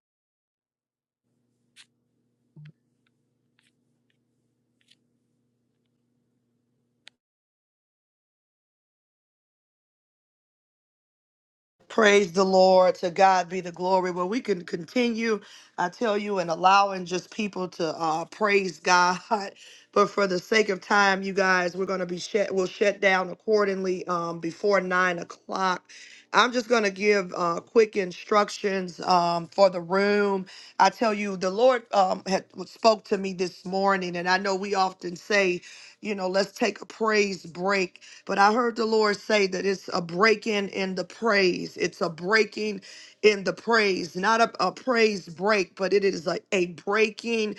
[SPEAKER 1] Praise the Lord. To God be the glory. Well, we can continue, I tell you, and allowing just people to uh, praise God. But for the sake of time, you guys, we're going to be shut. We'll shut down accordingly um, before nine o'clock. I'm just going to give uh, quick instructions um, for the room. I tell you, the Lord um, had spoke to me this morning, and I know we often say, you know, let's take a praise break but I heard the Lord say that it's a breaking in the praise. It's a breaking in the praise, not a, a praise break, but it is a, a breaking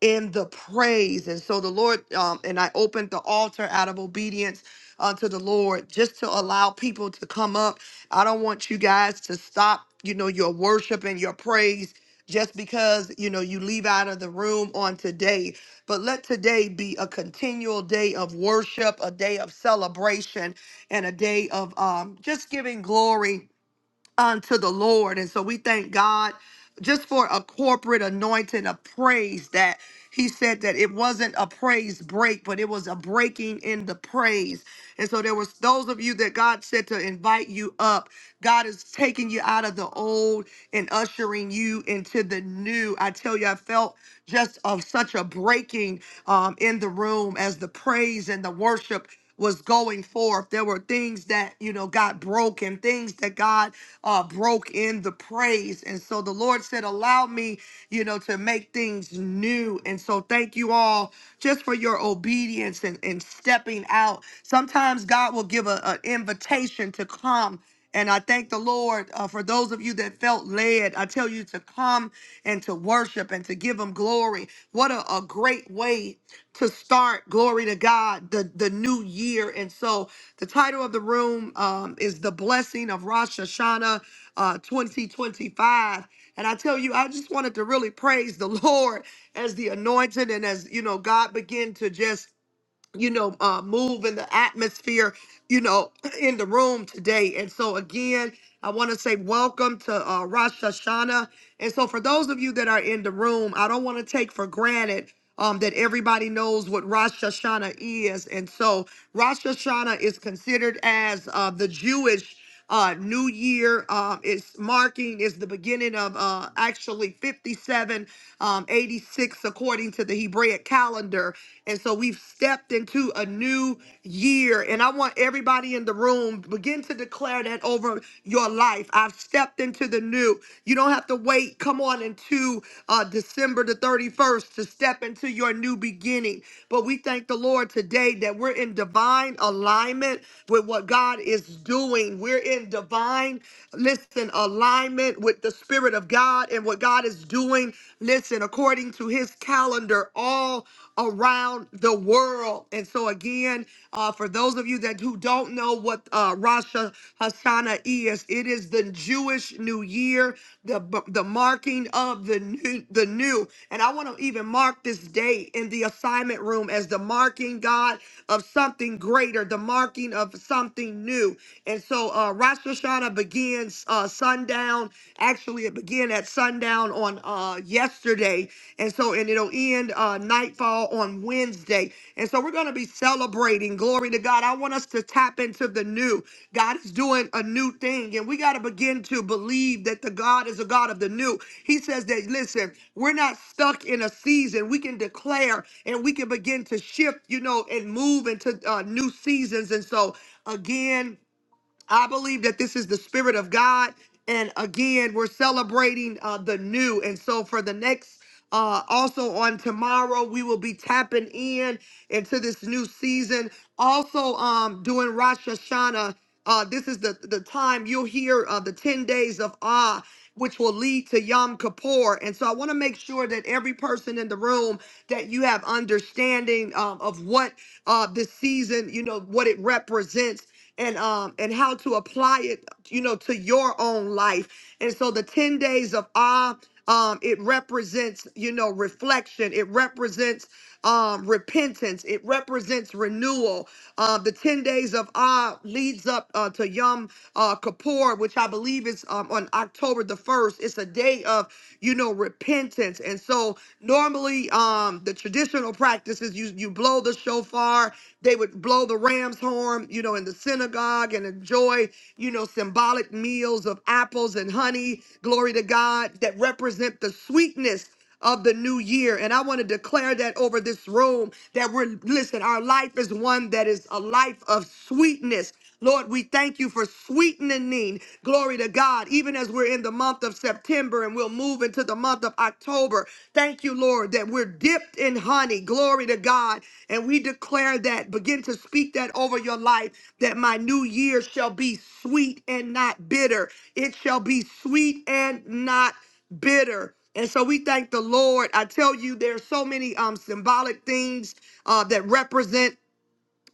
[SPEAKER 1] in the praise. And so the Lord, um, and I opened the altar out of obedience unto the Lord just to allow people to come up. I don't want you guys to stop, you know, your worship and your praise just because, you know, you leave out of the room on today. But let today be a continual day of worship, a day of celebration, and a day of um, just giving glory unto the Lord. And so we thank God just for a corporate anointing of praise that he said that it wasn't a praise break, but it was a breaking in the praise. And so there was those of you that God said to invite you up. God is taking you out of the old and ushering you into the new. I tell you, I felt just of such a breaking um, in the room as the praise and the worship was going forth. There were things that, you know, got broken, things that God uh, broke in the praise. And so the Lord said, Allow me, you know, to make things new. And so thank you all just for your obedience and, and stepping out. Sometimes God will give a- an invitation to come. And I thank the Lord uh, for those of you that felt led. I tell you to come and to worship and to give Him glory. What a, a great way to start, glory to God, the, the new year. And so, the title of the room um, is The Blessing of Rosh Hashanah uh, 2025. And I tell you, I just wanted to really praise the Lord as the anointed and as, you know, God began to just you know, uh, move in the atmosphere, you know, in the room today. And so, again, I want to say welcome to uh, Rosh Hashanah. And so, for those of you that are in the room, I don't want to take for granted um, that everybody knows what Rosh Hashanah is. And so, Rosh Hashanah is considered as uh, the Jewish. Uh, New Year um, is marking is the beginning of uh, actually 57, um, 86 according to the Hebraic calendar, and so we've stepped into a new year. And I want everybody in the room begin to declare that over your life. I've stepped into the new. You don't have to wait. Come on into uh, December the 31st to step into your new beginning. But we thank the Lord today that we're in divine alignment with what God is doing. We're in divine, listen, alignment with the Spirit of God and what God is doing. Listen, according to his calendar, all around the world. And so, again, uh, for those of you that who don't know what uh, Rosh Hashanah is, it is the Jewish New Year, the the marking of the new, the new. And I want to even mark this day in the assignment room as the marking God of something greater, the marking of something new. And so, uh, Rosh Hashanah begins uh, sundown. Actually, it began at sundown on uh, yesterday and so, and it'll end uh, nightfall on Wednesday. And so, we're going to be celebrating. Glory to God. I want us to tap into the new. God is doing a new thing, and we got to begin to believe that the God is a God of the new. He says that, listen, we're not stuck in a season. We can declare and we can begin to shift, you know, and move into uh, new seasons. And so, again, I believe that this is the Spirit of God. And again, we're celebrating uh, the new. And so for the next, uh, also on tomorrow, we will be tapping in into this new season. Also, um, doing Rosh Hashanah. Uh, this is the, the time you'll hear uh, the 10 days of awe, which will lead to Yom Kippur. And so I want to make sure that every person in the room, that you have understanding um, of what uh, this season, you know, what it represents and um and how to apply it, you know, to your own life. And so the 10 days of awe, um, it represents, you know, reflection, it represents um repentance, it represents renewal. Uh, the 10 days of awe leads up uh, to Yom uh, Kippur, which I believe is um, on October the 1st. It's a day of, you know, repentance. And so normally um, the traditional practice is you, you blow the shofar, they would blow the ram's horn, you know, in the synagogue and enjoy, you know, symbolic meals of apples and honey, glory to God, that represent the sweetness of the new year. And I want to declare that over this room that we're, listen, our life is one that is a life of sweetness. Lord, we thank you for sweetening. Glory to God. Even as we're in the month of September and we'll move into the month of October. Thank you, Lord, that we're dipped in honey. Glory to God. And we declare that, begin to speak that over your life, that my new year shall be sweet and not bitter. It shall be sweet and not bitter. And so we thank the Lord. I tell you, there are so many um, symbolic things uh, that represent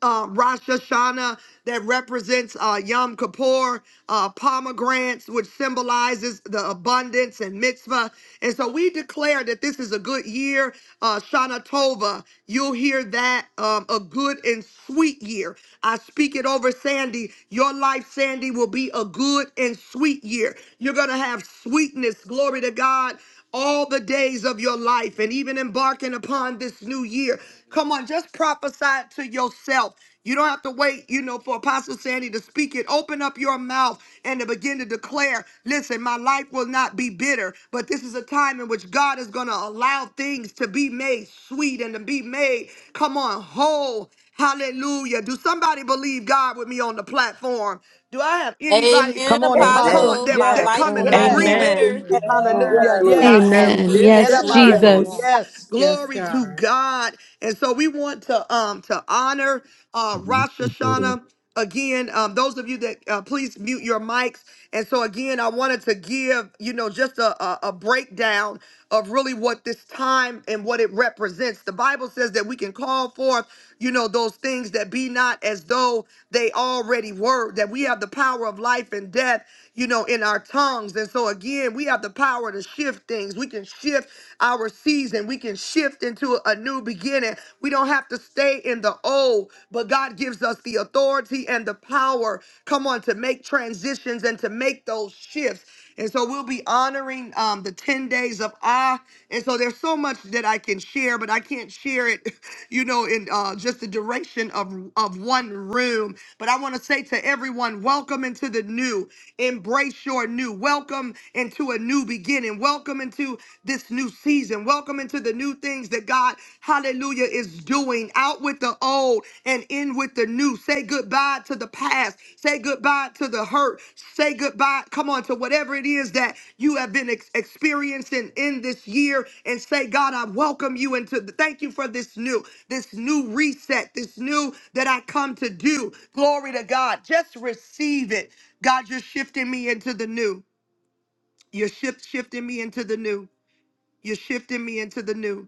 [SPEAKER 1] uh, Rosh Hashanah that represents uh, Yom Kippur, uh, pomegranates, which symbolizes the abundance and mitzvah. And so we declare that this is a good year, uh, Shana Tova. You'll hear that um, a good and sweet year. I speak it over Sandy. Your life, Sandy, will be a good and sweet year. You're going to have sweetness, glory to God, all the days of your life and even embarking upon this new year. Come on, just prophesy it to yourself. You don't have to wait, you know, for Apostle Sandy to speak it. Open up your mouth and to begin to declare, listen, my life will not be bitter, but this is a time in which God is going to allow things to be made sweet and to be made, come on, whole Hallelujah. Do somebody believe God with me on the platform? Do I have anybody
[SPEAKER 4] Amen,
[SPEAKER 10] Come on,
[SPEAKER 3] yes,
[SPEAKER 1] come
[SPEAKER 5] Amen.
[SPEAKER 1] on
[SPEAKER 10] Apostle.
[SPEAKER 4] Apostle.
[SPEAKER 1] that,
[SPEAKER 4] My
[SPEAKER 5] Amen.
[SPEAKER 1] that
[SPEAKER 10] Yes,
[SPEAKER 4] life
[SPEAKER 1] come in
[SPEAKER 4] will
[SPEAKER 3] yes,
[SPEAKER 4] not be
[SPEAKER 10] yes.
[SPEAKER 1] agreement?
[SPEAKER 4] bitter
[SPEAKER 17] Amen.
[SPEAKER 25] Yes,
[SPEAKER 10] Hallelujah.
[SPEAKER 24] Yes,
[SPEAKER 4] in
[SPEAKER 25] Lord.
[SPEAKER 24] I
[SPEAKER 10] Yes.
[SPEAKER 24] am
[SPEAKER 2] Amen.
[SPEAKER 4] Jesus'
[SPEAKER 24] dipped
[SPEAKER 4] name.
[SPEAKER 2] Yes,
[SPEAKER 24] in
[SPEAKER 25] Yes.
[SPEAKER 10] Yarabaso,
[SPEAKER 24] honey.
[SPEAKER 2] Jesus.
[SPEAKER 3] hallelujah.
[SPEAKER 10] yes.
[SPEAKER 24] Yes,
[SPEAKER 1] Glory to
[SPEAKER 24] God.
[SPEAKER 1] God. And so we want to um to honor uh Rosh
[SPEAKER 8] Amen.
[SPEAKER 1] Hashanah. Again, um, those of you that uh, please mute your mics. And so again, I wanted to give, you know, just a, a, a breakdown of really what this time and what it represents. The Bible says that we can call forth, you know, those things that be not as though they already were, that we have the power of life and death, you know, in our tongues. And so, again, we have the power to shift things. We can shift our season. We can shift into a new beginning. We don't have to stay in the old, but God gives us the authority and the power, come on, to make transitions and to make those shifts. And so we'll be honoring um, the 10 days of Ah. And so there's so much that I can share, but I can't share it, you know, in uh, just the duration of, of one room. But I want to say to everyone, welcome into the new. Embrace your new. Welcome into a new beginning. Welcome into this new season. Welcome into the new things that God, hallelujah, is doing. Out with the old and in with the new. Say goodbye to the past. Say goodbye to the hurt. Say goodbye, come on, to whatever it is that you have been ex- experiencing in this year and say, God, I welcome you into thank you for this new, this new reset, this new that I come to do. Glory to God. Just receive it. God, you're shifting me into the new. You're shift, shifting me into the new. You're shifting me into the new.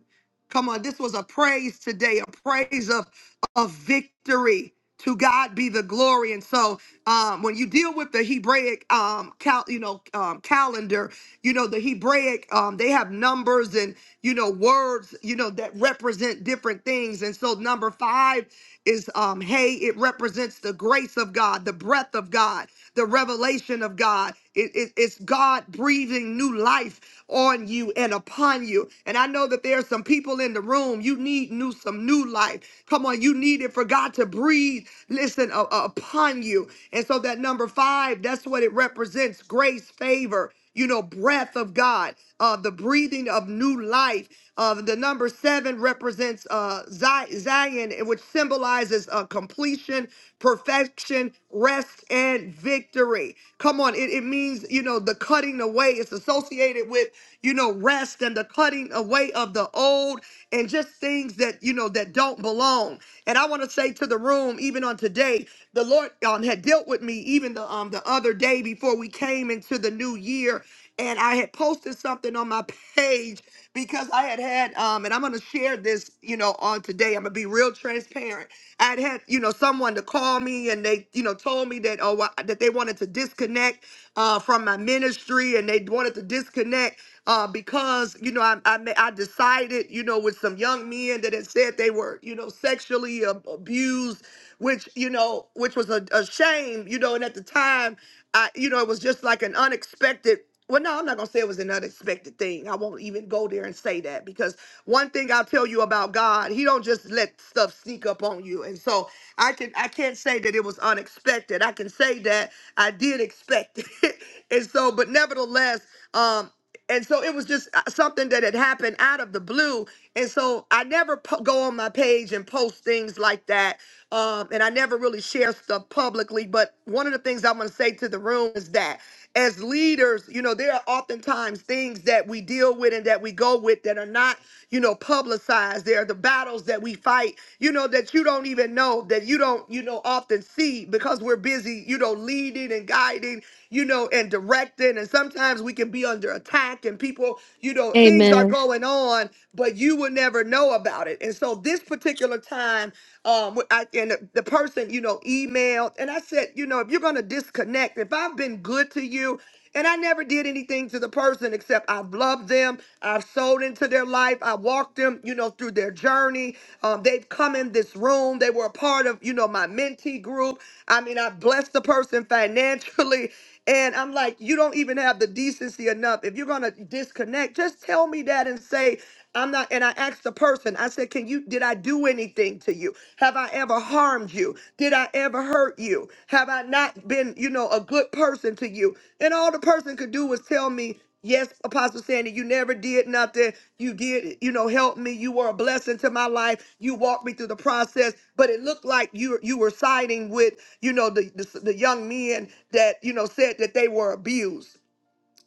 [SPEAKER 1] Come on, this was a praise today, a praise of of victory. To God be the glory. And so, um, when you deal with the Hebraic, um, cal- you know, um, calendar, you know the Hebraic, um, they have numbers and you know words, you know that represent different things. And so, number five is um, hey, it represents the grace of God, the breath of God, the revelation of God. It, it- it's God breathing new life on you and upon you. And I know that there are some people in the room. You need new some new life. Come on, you need it for God to breathe. Listen uh, uh, upon you. And so that number five, that's what it represents: grace, favor. You know, breath of God, uh, the breathing of new life. Uh, the number seven represents uh, Zi- Zion, which symbolizes uh, completion, perfection, rest, and victory. Come on, it, it means, you know, the cutting away. It's associated with you know, rest and the cutting away of the old and just things that, you know, that don't belong. And I want to say to the room, even on today, the Lord um, had dealt with me even the um the other day before we came into the new year. And I had posted something on my page because I had had, um, and I'm going to share this, you know, on today. I'm going to be real transparent. I had had, you know, someone to call me and they, you know, told me that, oh, I- that they wanted to disconnect uh, from my ministry and they wanted to disconnect uh, because you know I, I ma- I decided you know with some young men that had said they were you know sexually ab- abused, which you know which was a, a shame you know and at the time I you know it was just like an unexpected. Well, no, I'm not gonna say it was an unexpected thing. I won't even go there and say that because one thing I'll tell you about God, He don't just let stuff sneak up on you. And so I can I can't say that it was unexpected. I can say that I did expect it. and so, but nevertheless. um. And so it was just uh, something that had happened out of the blue. And so I never po- go on my page and post things like that. Um, and I never really share stuff publicly. But one of the things I'm going to say to the room is that as leaders, you know, there are oftentimes things that we deal with and that we go with that are not, you know, publicized. There are the battles that we fight, you know, that you don't even know, that you don't, you know, often see because we're busy, you know, leading and guiding you know, and directing. And sometimes we can be under attack and people, you know, things are
[SPEAKER 2] Amen.
[SPEAKER 1] going on, but you will never know about it. And so this particular time, um, I, and the the person, you know, emailed and I said, you know, if you're going to disconnect, if I've been good to you, and I never did anything to the person except I've loved them. I've sold into their life. I walked them, you know, through their journey. Um, they've come in this room. They were a part of, you know, my mentee group. I mean, I blessed the person financially. And I'm like, you don't even have the decency enough. If you're gonna disconnect, just tell me that and say, I'm not. And I asked the person, I said, Can you, did I do anything to you? Have I ever harmed you? Did I ever hurt you? Have I not been, you know, a good person to you? And all the person could do was tell me, Yes, Apostle Sandy, you never did nothing. You did, you know, help me. You were a blessing to my life. You walked me through the process, but it looked like you you were siding with you know, the, the the young men that you know said that they were abused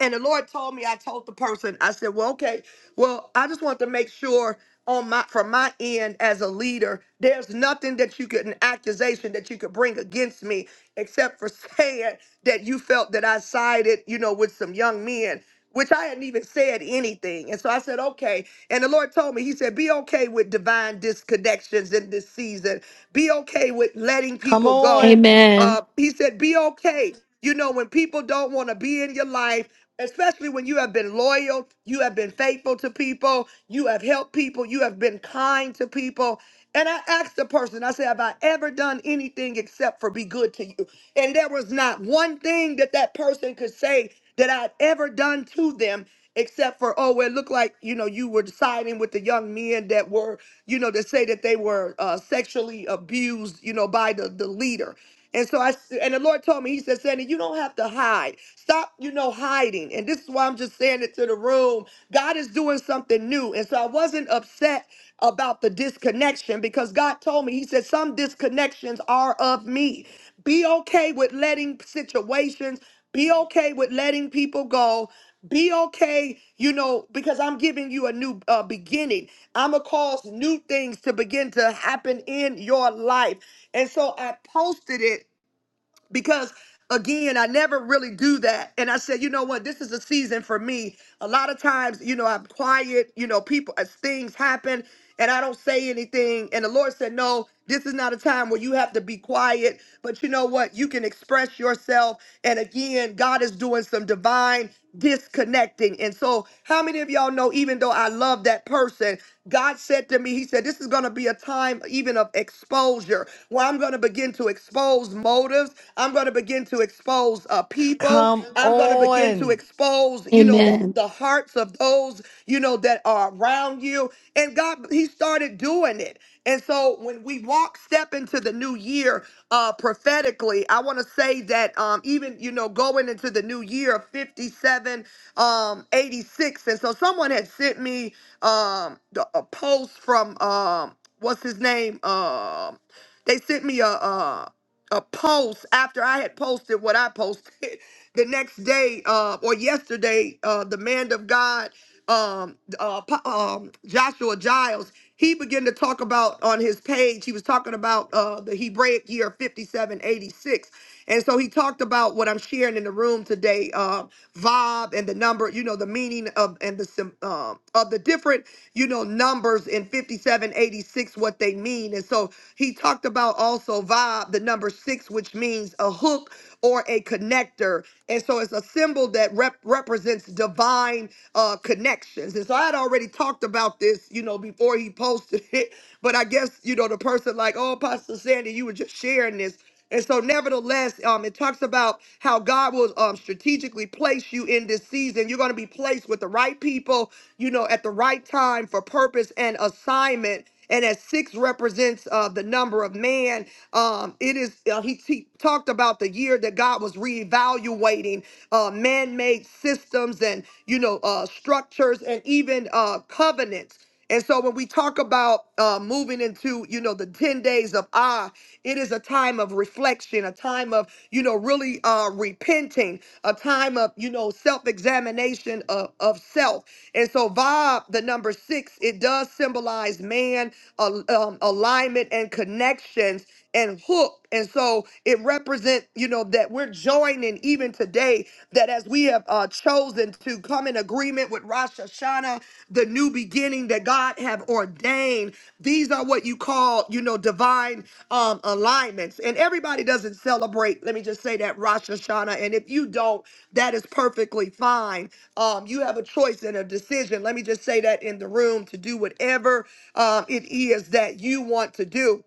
[SPEAKER 1] and the Lord told me, I told the person, I said, well, okay, well, I just want to make sure on my from my end as a leader, there's nothing that you could an accusation that you could bring against me except for saying that you felt that I sided, you know, with some young men, which I hadn't even said anything. And so I said, okay. And the Lord told me, He said, be okay with divine disconnections in this season. Be okay with letting people go.
[SPEAKER 2] Amen.
[SPEAKER 1] Uh, he said, be okay you know, when people don't want to be in your life especially when you have been loyal, you
[SPEAKER 30] Uh,
[SPEAKER 1] have been faithful to people, you have helped people, you have been kind to people. And I asked the person, I said, Have I ever done anything except for be good to you? And there was not one thing that that person could say that I'd ever done to them except for, oh, well, it looked like, you know, you were siding with the young men that were, you know, that say that they were uh, sexually abused, you know, by the, the leader. And so I, s- and the Lord told me, He said, Sandy, you don't have to hide. Stop, you know, hiding. And this is why I'm just saying it to the room. God is doing something new. And so I wasn't upset about the disconnection because God told me, He said, some disconnections are of me. Be okay with letting situations, be okay with letting people go. Be okay, you know, because I'm giving you a new uh, beginning. I'm going to cause new things to begin to happen in your life. And so I posted it because again i never really do that and i said you know what this is a season for me a lot of times you know i'm quiet you know people as things happen and i don't say anything and the lord said no this is not a time where you have to be quiet but you know what you can express yourself and again god is doing some divine disconnecting and so how many of y'all know even though i love that person god said to me he said this is going to be a time even of exposure where i'm going to begin to expose motives I'm going to begin to expose uh, people. I'm going to begin to
[SPEAKER 10] On.
[SPEAKER 1] expose, you know, the,
[SPEAKER 2] Amen.
[SPEAKER 1] the hearts of those, you know, that are around you. And God, He started doing it. And so when we walk, step into the new year uh, prophetically, I want to say that um, even, you know, going into the new year of 57, um, 86. And so someone had sent me um, the, a post from, um, what's his name? Um, they sent me a, um a post after I had posted what I posted the next day uh, or yesterday. Uh, the man of God, um, uh, Po- um, Joshua Giles, he began to talk about on his page. He was talking about uh, the Hebraic year 5786, and so he talked about what I'm sharing in the room today, uh, Vob and the number, you know, the meaning of and the sim- uh, of the different, you know, numbers in 5786, what they mean, and so he talked about also vibe, the number six, which means a hook or a connector. And so it's a symbol that rep- represents divine uh, connections. And so I had already talked about this, you know, before he posted it. But I guess, you know, the person like, oh, Pastor Sandy, you were just sharing this. And so, nevertheless, um, it talks about how God will um, strategically place you in this season. You're going to be placed with the right people, you know, at the right time for purpose and assignment and as six represents uh, the number of man um, it is uh, he, he talked about the year that god was reevaluating uh, man-made systems and you know uh, structures and even uh, covenants and so when we talk about uh, moving into, you know, the 10 days of ah, it is a time of reflection, a time of, you know, really uh, repenting, a time of, you know, self-examination of, of self. And so, Bob, the number six, it does symbolize man, al- um, alignment, and connections and hook. And so it represents, you know, that we're joining even today, that as we have uh, chosen to come in agreement with Rosh Hashanah, the new beginning that God have ordained, these are what you call, you know, divine um, alignments. And everybody doesn't celebrate, let me just say that, Rosh Hashanah. And if you don't, that is perfectly fine. Um, you have a choice and a decision. Let me just say that in the room to do whatever um, it is that you want to do.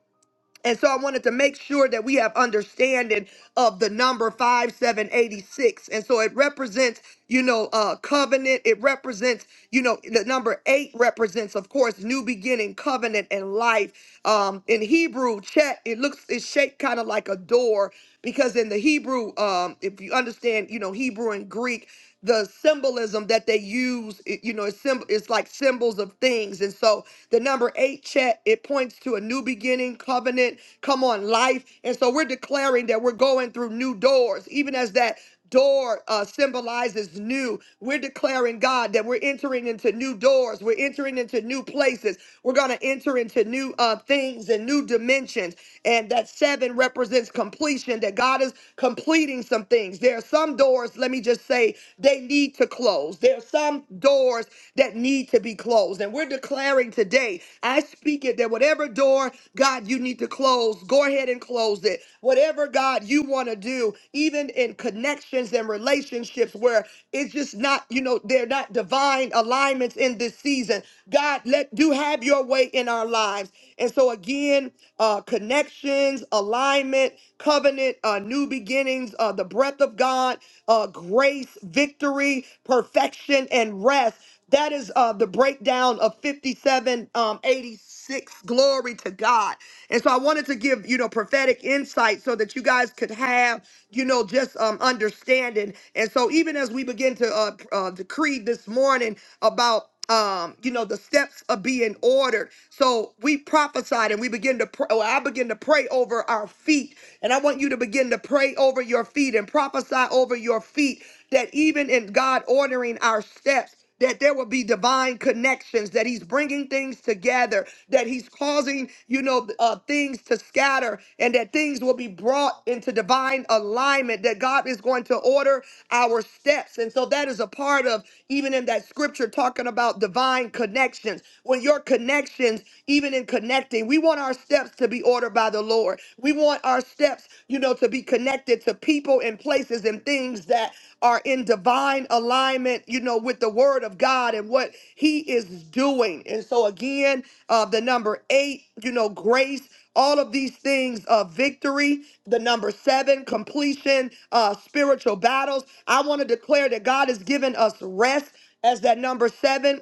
[SPEAKER 1] And so I wanted to make sure that we have understanding of the number 5786. And so it represents, you know, uh covenant. It represents, you know, the number eight represents, of course, new beginning, covenant, and life. Um, in Hebrew, chet, it looks it's shaped kind of like a door because in the Hebrew, um, if you understand, you know, Hebrew and Greek, the symbolism that they use, it, you know, it's, symb- it's like symbols of things. And so the number eight check, it points to a new beginning, covenant, come on, life. And so we're declaring that we're going through new doors, even as that door uh, symbolizes new. We're declaring, God, that we're entering into new doors. We're entering into new places. We're going to enter into new uh, things and new dimensions. And that seven represents completion, that God is completing some things. There are some doors, let me just say, they need to close. There are some doors that need to be closed. And we're declaring today, I speak it that whatever door, God, you need to close, go ahead and close it. Whatever, God, you want to do, even in connections and relationships where it's just not, you know, they're not divine alignments in this season. God, let do have your way in our lives. And so again, uh, connections, alignment, covenant, uh, new beginnings, uh, the breath of God, uh, grace, victory, perfection, and rest. That is uh, the breakdown of 57, um, 86. Glory to God. And so I wanted to give, you know, prophetic insight so that you guys could have, you know, just um, understanding. And so even as we begin to uh, uh, decree this morning about um, you know, the steps of being ordered. So we prophesied and we begin to pray. Or I begin to pray over our feet. And I want you to begin to pray over your feet and prophesy over your feet that even in God ordering our steps, that there will be divine connections, that he's bringing things together, that he's causing, you know, uh, things to scatter, and that things will be brought into divine alignment, that God is going to order our steps. And so that is a part of, even in that scripture, talking about divine connections. When your connections, even in connecting, we want our steps to be ordered by the Lord. We want our steps, you know, to be connected to people and places and things that are in divine alignment, you know, with the word of God and what he is doing. And so, again, uh, the number eight, you know, grace, all of these things of victory. The number seven, completion, uh, spiritual battles. I want to declare that God has given us rest as that number seven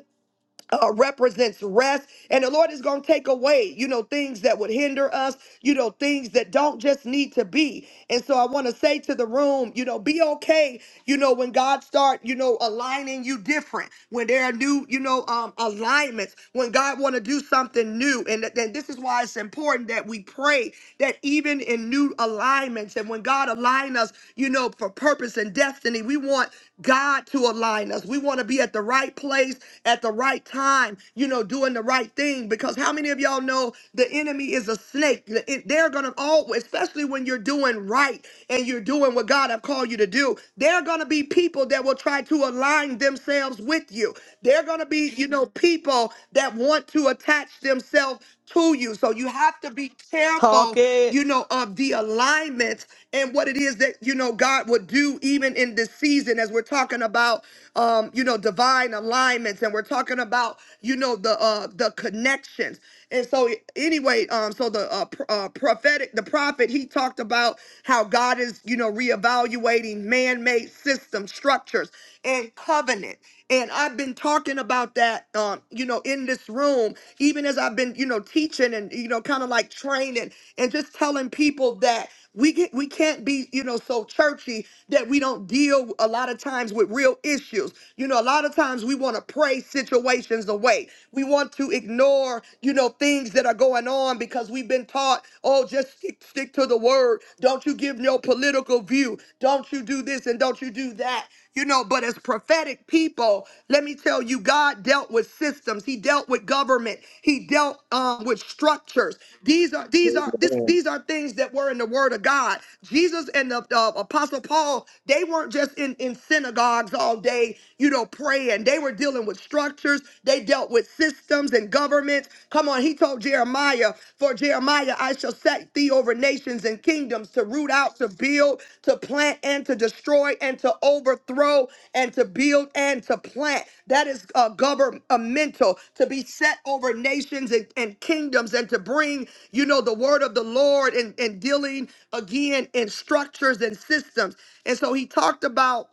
[SPEAKER 1] uh, represents rest. And the Lord is going to take away, you know, things that would hinder us, you know, things that don't just need to be. And so I want to say to the room, you know, be okay, you know, when God start, you know, aligning you different, when there are new, you know, um, alignments, when God want to do something new. And then this is why it's important that we pray that even in new alignments and when God align us, you know, for purpose and destiny, we want God to align us. We want to be at the right place at the right time, you know, doing the right thing. Because how many of y'all know the enemy is a snake? The- it- They're going to always, especially when you're doing right and you're doing what God have called you to do, there are going to be people that will try to align themselves with you. There are going to be, you know, people that want to attach themselves to you. So you have to be
[SPEAKER 10] Talk
[SPEAKER 1] careful,
[SPEAKER 10] it.
[SPEAKER 1] you know, of the alignment and what it is that you know God would do even in this season as we're talking about um you know divine alignments and we're talking about you know the uh the connections and so anyway um so the uh, pr- uh prophetic the prophet he talked about how God is you know reevaluating man-made system structures and covenant and I've been talking about that, um, you know, in this room, even as I've been, you know, teaching and, you know, kind of like training and just telling people that we get we can't be, you know, so churchy that we don't deal a lot of times with real issues. You know, a lot of times we want to pray situations away. We want to ignore, you know, things that are going on because we've been taught, oh, just stick, stick to the word. Don't you give no political view. Don't you do this and don't you do that. You know, but as prophetic people, let me tell you, God dealt with systems. He dealt with government. He dealt um, with structures. These are these are this
[SPEAKER 18] Amen.
[SPEAKER 1] these are things that were in the Word of God. Jesus and the uh, Apostle Paul, they weren't just in in synagogues all day, you know, praying. They were dealing with structures. They dealt with systems and governments. Come on, he told Jeremiah, "For Jeremiah, I shall set thee over nations." and kingdoms to root out, to build, to plant, and to destroy, and to overthrow, and to build, and to plant. That is uh, governmental, to be set over nations and, and kingdoms, and to bring, you know, the word of the Lord and, and dealing again in structures and systems. And so he talked about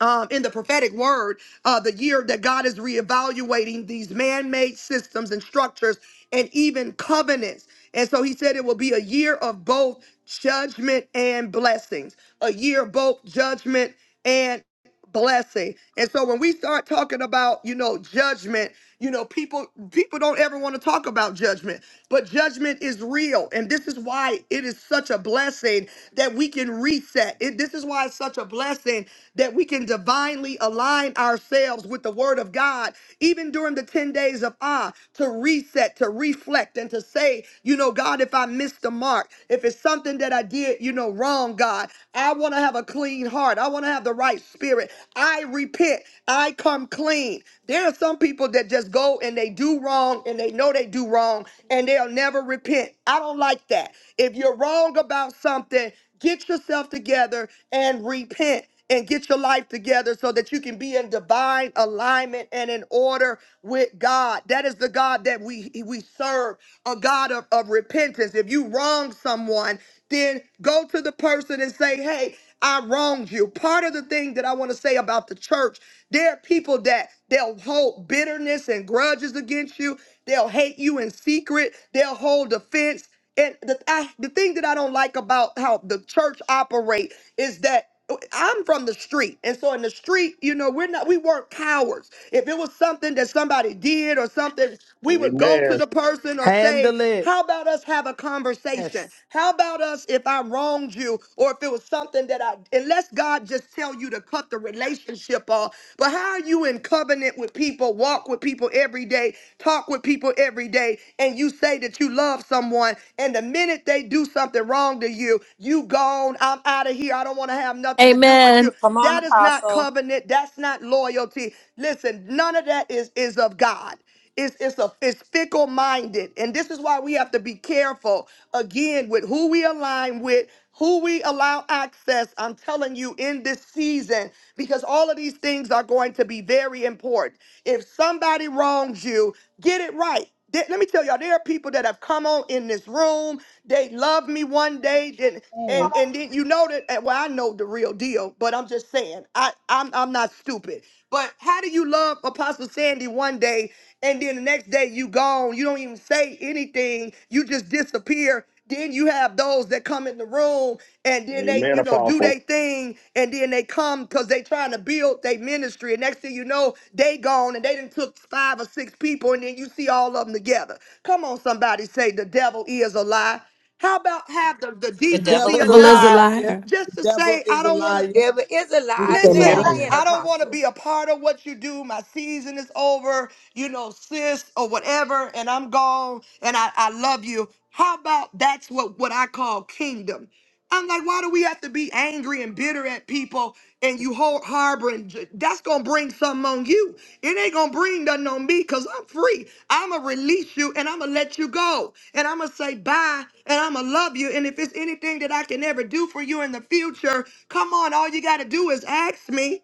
[SPEAKER 1] um, in the prophetic word, uh, the year that God is reevaluating these man made systems and structures and even covenants. And so he said it will be a year of both judgment and blessings, a year of both judgment and blessing. And so when we start talking about, you know, judgment, you know, people people don't ever want to talk about judgment. But judgment is real. And this is why it is such a blessing that we can reset. It, this is why it's such a blessing that we can divinely align ourselves with the word of God, even during the 10 days of Ah, to reset, to reflect, and to say, you know, God, if I missed the mark, if it's something that I did, you know, wrong, God, I want to have a clean heart. I want to have the right spirit. I repent. I come clean. There are some people that just go and they do wrong and they know they do wrong and they'll never repent. I don't like that. If you're wrong about something, get yourself together and repent and get your life together so that you can be in divine alignment and in order with God. That is the God that we we serve, a God of, of repentance. If you wrong someone, then go to the person and say, hey, I wronged you. Part of the thing that I want to say about the church, there are people that they'll hold bitterness and grudges against you. They'll hate you in secret. They'll hold offense. And the I, the thing that I don't like about how the church operate is that I'm from the street. And so in the street, you know, we're not we weren't cowards. If it was something that somebody did or something, we would go to
[SPEAKER 18] Amen.
[SPEAKER 1] the person or say,
[SPEAKER 10] Handle it.
[SPEAKER 1] how about us have a conversation?
[SPEAKER 10] Yes.
[SPEAKER 1] How about us if I wronged you or if it was something that I unless God just tell you to cut the relationship off. But how are you in covenant with people, walk with people every day, talk with people every day, and you say that you love someone, and the minute they do something wrong to you, you gone, I'm out of here. I don't want to have nothing to do with
[SPEAKER 2] Amen.
[SPEAKER 1] you.
[SPEAKER 4] Come on,
[SPEAKER 1] That is not
[SPEAKER 4] Apostle.
[SPEAKER 1] covenant. That's not loyalty. Listen, none of that is is of God. It's, it's a it's fickle minded, and this is why we have to be careful again with who we align with, who we allow access. I'm telling you, in this season, because all of these things are going to be very important. If somebody wrongs you, get it right. There- let me tell y'all, there are people that have come on in this room. They love me one day, then
[SPEAKER 31] man
[SPEAKER 1] and and then you know that. and, Well, I know the real deal, but I'm just saying, I I'm I'm not stupid. But how do you love Apostle Sandy one day and then the next day you gone. You don't even say anything. You just disappear. Then you have those that come in the room and then they,
[SPEAKER 18] Amen,
[SPEAKER 1] you know, do
[SPEAKER 18] Apostle.
[SPEAKER 1] their thing and then they come because they trying to build their ministry. And next thing you know, they gone and they done took five or six people and then you see all of them together. Come on, somebody say the devil is a lie. How about have the, the
[SPEAKER 4] The
[SPEAKER 10] The
[SPEAKER 4] devil
[SPEAKER 1] decency
[SPEAKER 10] devil
[SPEAKER 4] is a
[SPEAKER 2] Of
[SPEAKER 10] is a
[SPEAKER 1] enough
[SPEAKER 2] a
[SPEAKER 4] lie.
[SPEAKER 10] liar.
[SPEAKER 2] liar.
[SPEAKER 1] just
[SPEAKER 10] The
[SPEAKER 1] to
[SPEAKER 10] devil
[SPEAKER 1] say, I
[SPEAKER 10] is a
[SPEAKER 1] don't want to
[SPEAKER 10] liar.
[SPEAKER 6] Devil is a lie.
[SPEAKER 5] We
[SPEAKER 6] I
[SPEAKER 31] is a
[SPEAKER 5] see
[SPEAKER 6] say it
[SPEAKER 5] you.
[SPEAKER 1] listen.
[SPEAKER 31] liar.
[SPEAKER 6] again,
[SPEAKER 1] I don't want to
[SPEAKER 6] Apostle.
[SPEAKER 1] be a part of what you do. My season is over you know, sis or whatever, and I'm gone and I, I love you. How about that's what, what I call kingdom? I'm like, why do we have to be angry and bitter at people and you hold harboring? j- That's going to bring something on you. It ain't going to bring nothing on me because I'm free. I'm going to release you and I'm going to let you go. And I'm going to say bye and I'm going to love you. And if it's anything that I can ever do for you in the future, come on. All you got to do is ask me.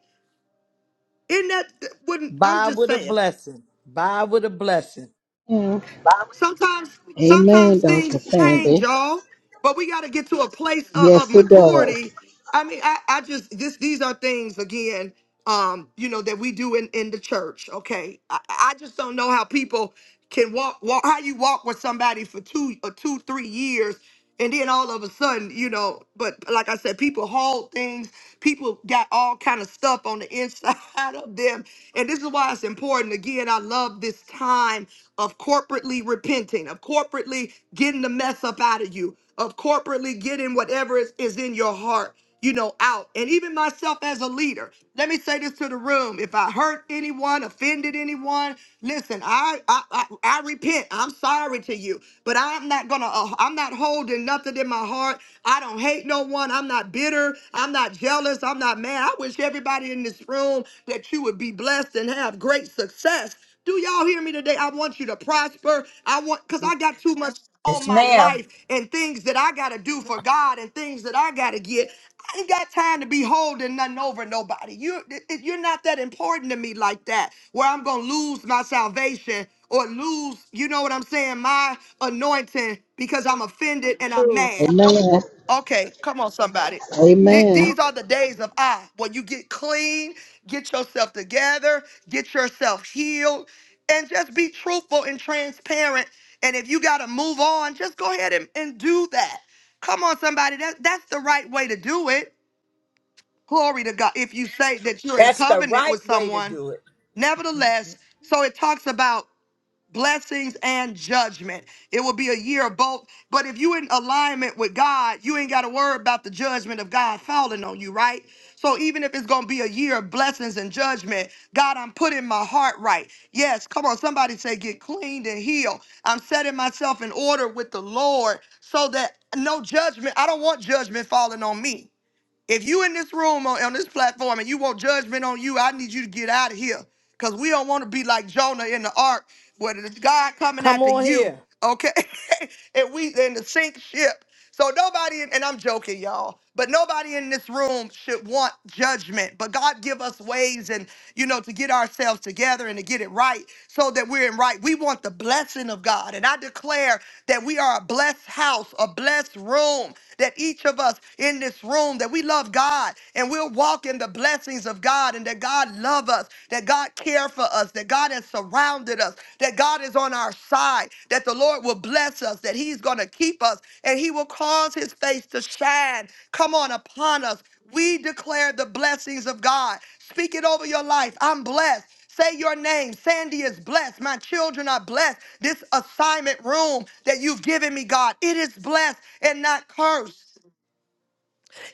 [SPEAKER 1] Isn't that wouldn't, I'm
[SPEAKER 10] Buy
[SPEAKER 1] just
[SPEAKER 10] with a
[SPEAKER 1] saying.
[SPEAKER 10] blessing. Buy with a blessing.
[SPEAKER 31] Yeah.
[SPEAKER 1] Sometimes,
[SPEAKER 31] Amen,
[SPEAKER 1] sometimes
[SPEAKER 31] Dr.
[SPEAKER 1] things change,
[SPEAKER 31] Sandy.
[SPEAKER 1] y'all. But we got to get to a place of, of
[SPEAKER 31] Yes, it does.
[SPEAKER 1] maturity. I mean, I, I just this these are things again, um, you know, that we do in in the church. Okay, I, I just don't know how people can walk walk how you walk with somebody for two or two three years. And then all of a sudden, you know, but like I said, people hold things. People got all kind of stuff on the inside of them, and this is why it's important. Again, I love this time of corporately repenting, of corporately getting the mess up out of you, of corporately getting whatever is, is in your heart, you know, out. And even myself as a leader, let me say this to the room. If I hurt anyone, offended anyone, listen, I I, I, I repent. I'm sorry to you, but I'm not gonna. Uh, I'm not holding nothing in my heart. I don't hate no one. I'm not bitter. I'm not jealous. I'm not mad. I wish everybody in this room that you would be blessed and have great success do y'all hear me today? I want you to prosper. I want because I got too much on
[SPEAKER 6] Yes,
[SPEAKER 1] my
[SPEAKER 6] ma'am.
[SPEAKER 1] life and things that I gotta do for God and things that I gotta get. I ain't got time to be holding nothing over nobody. You it- you're not that important to me like that, where I'm gonna lose my salvation or lose, you know what I'm saying, my anointing because I'm offended and I'm
[SPEAKER 31] True.
[SPEAKER 1] mad.
[SPEAKER 31] Amen.
[SPEAKER 1] Okay, come on, somebody. Th-
[SPEAKER 31] Amen.
[SPEAKER 1] These are the days of I, When you get clean, get yourself together, get yourself healed, and just be truthful and transparent. And if you got to move on, just go ahead and, and do that. Come on, somebody. That, that's the right way to do it. Glory to God. If you say that you're in
[SPEAKER 6] That's the
[SPEAKER 1] covenant with
[SPEAKER 6] right way to
[SPEAKER 1] someone,
[SPEAKER 6] do it.
[SPEAKER 1] nevertheless, so it talks about blessings and judgment. It will be a year of both. But if you in alignment with God, you ain't got to worry about the judgment of God falling on you, right? So even if it's going to be a year of blessings and judgment, God, I'm putting my heart right. Yes, come on, somebody say get cleaned and healed. I'm setting myself in order with the Lord so that no judgment, I don't want judgment falling on me. If you in this room on, on this platform and you want judgment on you, I need you to get out of here. Cause we don't want to be like Jonah in the ark, where it's God coming
[SPEAKER 10] Come
[SPEAKER 1] after
[SPEAKER 10] on
[SPEAKER 1] you,
[SPEAKER 10] here.
[SPEAKER 1] okay? and we in the sink ship. So nobody, and I'm joking, y'all, but nobody in this room should want judgment. But God give us ways and you know to get ourselves together and to get it right so that we're in right. We want the blessing of God. And I declare that we are a blessed house, a blessed room, that each of us in this room, that we love God and we'll walk in the blessings of God and that God love us, that God care for for us, that God has surrounded us, that God is on our side, that the Lord will bless us, that He's going to keep us, and He will cause His face to shine. Come on upon us. We declare the blessings of God. Speak it over your life. I'm blessed. Say your name. Sandy is blessed. My children are blessed. This assignment room that you've given me, God, it is blessed and not cursed.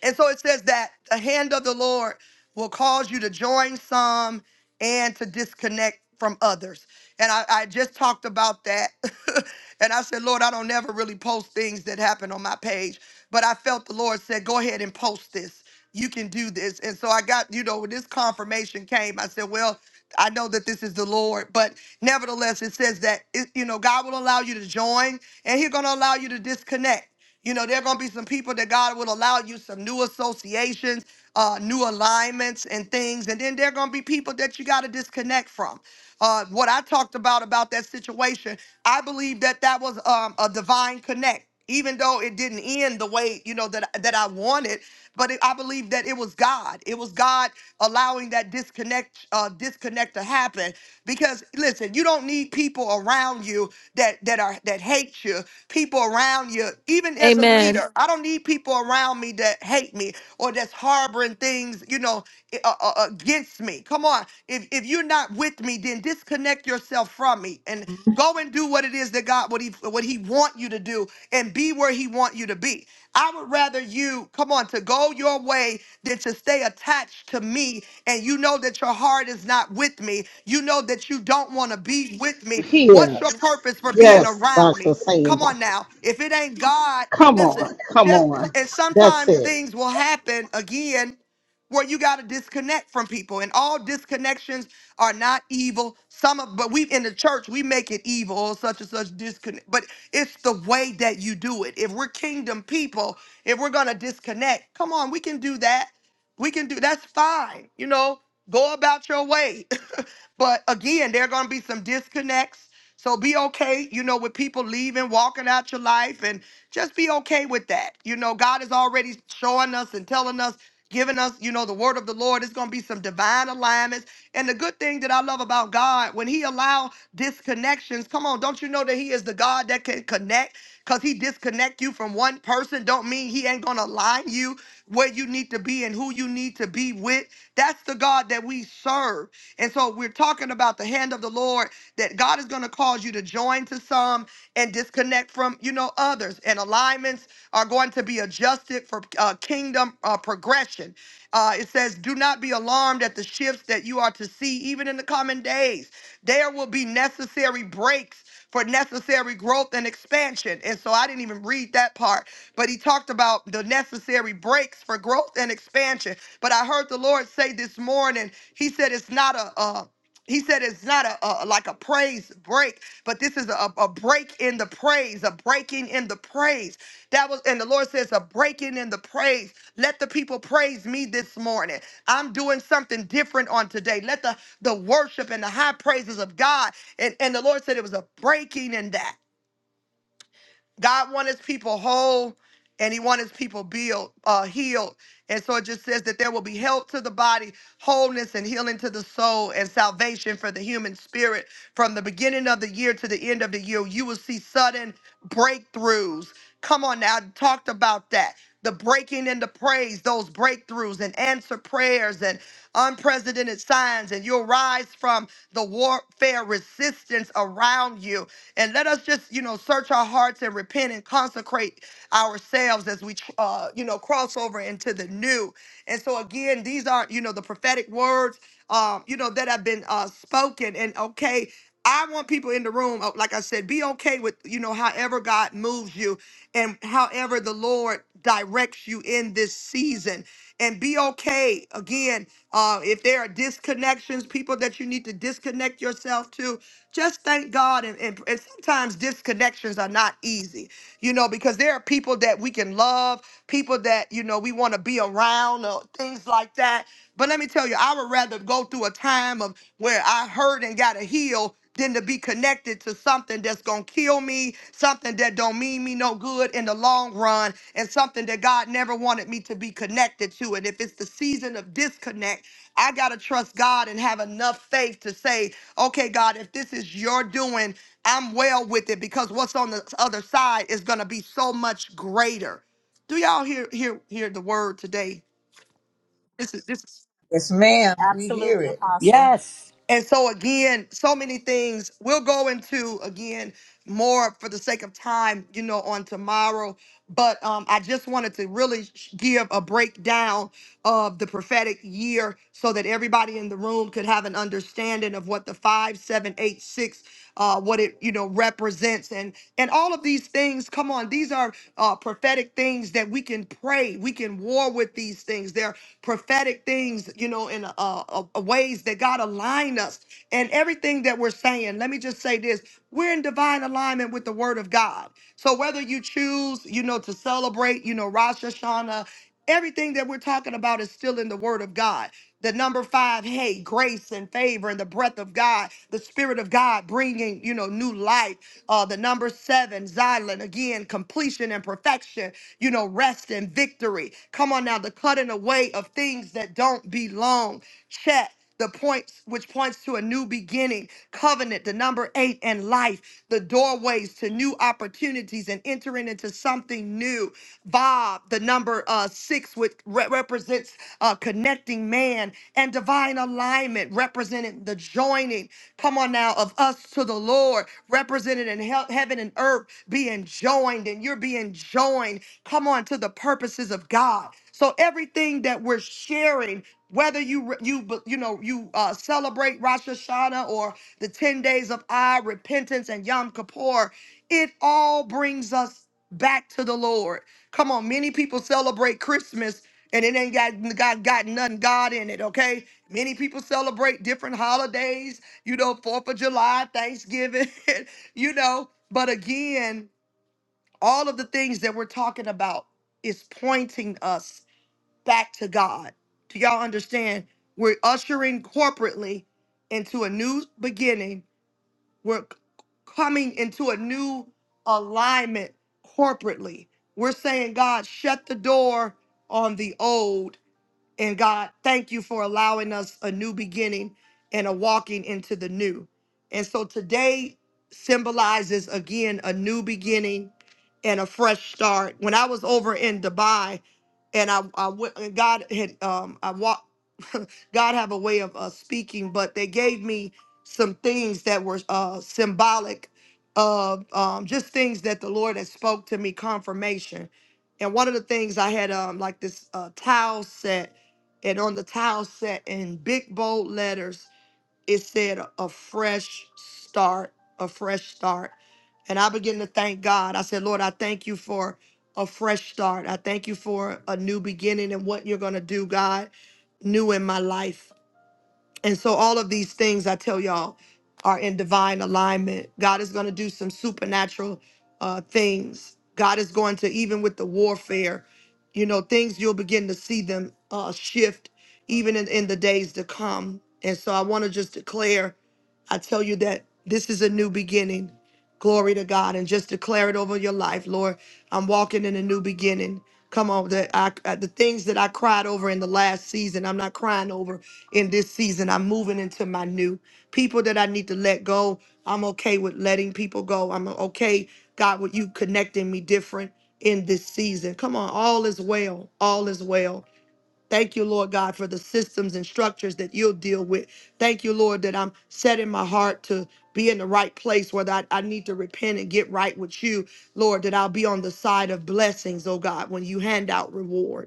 [SPEAKER 1] And so it says that the hand of the Lord will cause you to join some and to disconnect from others. And I, I just talked about that. and I said, Lord, I don't never really post things that happen on my page. But I felt the Lord said, go ahead and post this. You can do this. And so I got, you know, when this confirmation came, I said, well, I know that this is the Lord, but nevertheless, it says that, it, you know, God will allow you to join and he's going to allow you to disconnect. You know, there are going to be some people that God will allow you some new associations, uh, new alignments and things. And then there are going to be people that you got to disconnect from. Uh, what I talked about about that situation, I believe that that was um, a divine connect. Even though it didn't end the way you know that that I wanted, but it, I believe that it was God. It was God allowing that disconnect uh, disconnect to happen. Because listen, you don't need people around you that that are that hate you people around you, even as a
[SPEAKER 2] Amen.
[SPEAKER 1] leader. I don't need people around me that hate me or that's harboring things, you know, i- uh, uh, against me. Come on. If, if you're not with me, then disconnect yourself from me and go and do what it is that God, what he, what he want you to do and be where he want you to be. I would rather you, come on, to go your way than to stay attached to me and you know that your heart is not with me. You know that you don't want to be with me. What's
[SPEAKER 31] Here.
[SPEAKER 1] your purpose for being
[SPEAKER 31] Yes,
[SPEAKER 1] around me?
[SPEAKER 31] Dr.
[SPEAKER 1] Come
[SPEAKER 31] Sandy.
[SPEAKER 1] on now. If it ain't God,
[SPEAKER 31] Come
[SPEAKER 1] listen,
[SPEAKER 31] on. Come
[SPEAKER 1] just
[SPEAKER 31] on.
[SPEAKER 1] and
[SPEAKER 31] That's
[SPEAKER 1] sometimes
[SPEAKER 31] it.
[SPEAKER 1] things will happen again where you got to disconnect from people and all disconnections are not evil some of but we in the church we make it evil or such and such disconnect but it's the way that you do it if we're kingdom people if we're going to disconnect come on we can do that we can do that's fine you know go about your way but again, there are going to be some disconnects. So be okay, you know, with people leaving, walking out your life, and just be okay with that. You know, God is already showing us and telling us, giving us, you know, the word of the Lord. It's going to be some divine alignments. And the good thing that I love about God, when He allow disconnections, come on, don't you know that He is the God that can connect? Because He disconnect you from one person, don't mean He ain't going to align you where you need to be and who you need to be with. That's the God that we serve. And so we're talking about the hand of the Lord that God is going to cause you to join to some and disconnect from, you know, others. And alignments are going to be adjusted for uh, kingdom uh, progression. Uh, it says, do not be alarmed at the shifts that you are to see, even in the coming days. There will be necessary breaks for necessary growth and expansion. And so I didn't even read that part, but he talked about the necessary breaks for growth and expansion. But I heard the Lord say this morning, he said it's not a. Uh, he said it's not a, a like a praise break, but this is a, a break in the praise, a breaking in the praise. That was, and the Lord says, a breaking in the praise. Let the people praise me this morning. I'm doing something different on today. Let the the worship and the high praises of God. And, and the Lord said it was a breaking in that. God wants his people whole and he wants his people build, uh, healed. And so it just says that there will be health to the body, wholeness and healing to the soul, and salvation for the human spirit. From the beginning of the year to the end of the year, you will see sudden breakthroughs. Come on now, I talked about that. The breaking and the praise, those breakthroughs and answer prayers and unprecedented signs, and you'll rise from the warfare resistance around you and let us just, you know, search our hearts and repent and consecrate ourselves as we, uh, you know, cross over into the new. And so, again, these are, you know, the prophetic words, um, you know, that have been uh, spoken. And okay, I want people in the room, uh, like I said, be okay with, you know, however God moves you and however the Lord directs you in this season. And be okay, again, uh, if there are disconnections, people that you need to disconnect yourself to, just thank God. And, and, and sometimes disconnections are not easy, you know, because there are people that we can love, people that, you know, we want to be around or things like that. But let me tell you, I would rather go through a time of where I hurt and got to heal than to be connected to something that's gonna kill me, something that don't mean me no good in the long run, and something that God never wanted me to be connected to. And if it's the season of disconnect, I gotta trust God and have enough faith to say Okay, God, if this is your doing, I'm well with it because what's on the other side is going to be so much greater. Do y'all hear hear hear the word today? This is this.
[SPEAKER 6] Yes, ma'am. We hear
[SPEAKER 4] Absolutely,
[SPEAKER 6] it.
[SPEAKER 4] Apostle.
[SPEAKER 3] Yes.
[SPEAKER 1] And so again, so many things. We'll go into again more for the sake of time, you know, on tomorrow. But um, I just wanted to really sh- give a breakdown of the prophetic year so that everybody in the room could have an understanding of what the five, seven, eight, six, uh, what it you know represents, and and all of these things. Come on, these are uh, prophetic things that we can pray, we can war with these things. They're prophetic things, you know, in uh, uh, uh, ways that God align us and everything that we're saying. Let me just say this: we're in divine alignment with the Word of God. So whether you choose, you know, to celebrate, you know, Rosh Hashanah, everything that we're talking about is still in the Word of God. The number five, hey, grace and favor and the breath of God, the Spirit of God bringing, you know, new life. Uh, the number seven, Xylan, again, completion and perfection you know, rest and victory. Come on now, the cutting away of things that don't belong. Check. The points which points to a new beginning, covenant, the number eight, and life, the doorways to new opportunities and entering into something new. Bob, the number uh, six, which re- represents uh, connecting man and divine alignment, representing the joining, come on now, of us to the Lord, represented in hea- heaven and earth, being joined, and you're being joined Come on to the purposes of God. So everything that we're sharing, whether you you you know you uh, celebrate Rosh Hashanah or the ten days of I repentance and Yom Kippur, it all brings us back to the Lord. Come on, many people celebrate Christmas and it ain't got got got nothing God in it. Okay, many people celebrate different holidays. You know, Fourth of July, Thanksgiving. you know, but again all of the things that we're talking about is pointing us back to God. Do y'all understand? We're ushering corporately into a new beginning. We're c- coming into a new alignment corporately. We're saying, God, shut the door on the old and God, thank you for allowing us a new beginning and a walking into the new. And so today symbolizes again a new beginning and a fresh start. When I was over in Dubai, and I, I went, and God had, um, I walked, God have a way of uh, speaking, but they gave me some things that were uh, symbolic of um, just things that the Lord had spoke to me, confirmation. And one of the things I had, um, like this uh, towel set, and on the towel set in big bold letters, it said a fresh start, a fresh start and I began to thank God. I said, Lord, I thank you for a fresh start. I thank you for a new beginning and what you're going to do, God, new in my life. And so all of these things I tell y'all are in divine alignment. God is going to do some supernatural uh, things. God is going to even with the warfare, you know, things you'll begin to see them uh, shift even in, in the days to come. And so I want to just declare, I tell you that this is a new beginning. Glory to God, and just declare it over your life, Lord. I'm walking in a new beginning. Come on, that I, uh, the things that I cried over in the last season, I'm not crying over in this season. I'm moving into my new people that I need to let go. I'm okay with letting people go. I'm okay, God, with you connecting me different in this season. Come on, all is well. All is well. Thank you, Lord God, for the systems and structures that you'll deal with. Thank you, Lord, that I'm setting my heart to be in the right place where that I need to repent and get right with you, Lord, that I'll be on the side of blessings, oh God, when you hand out reward.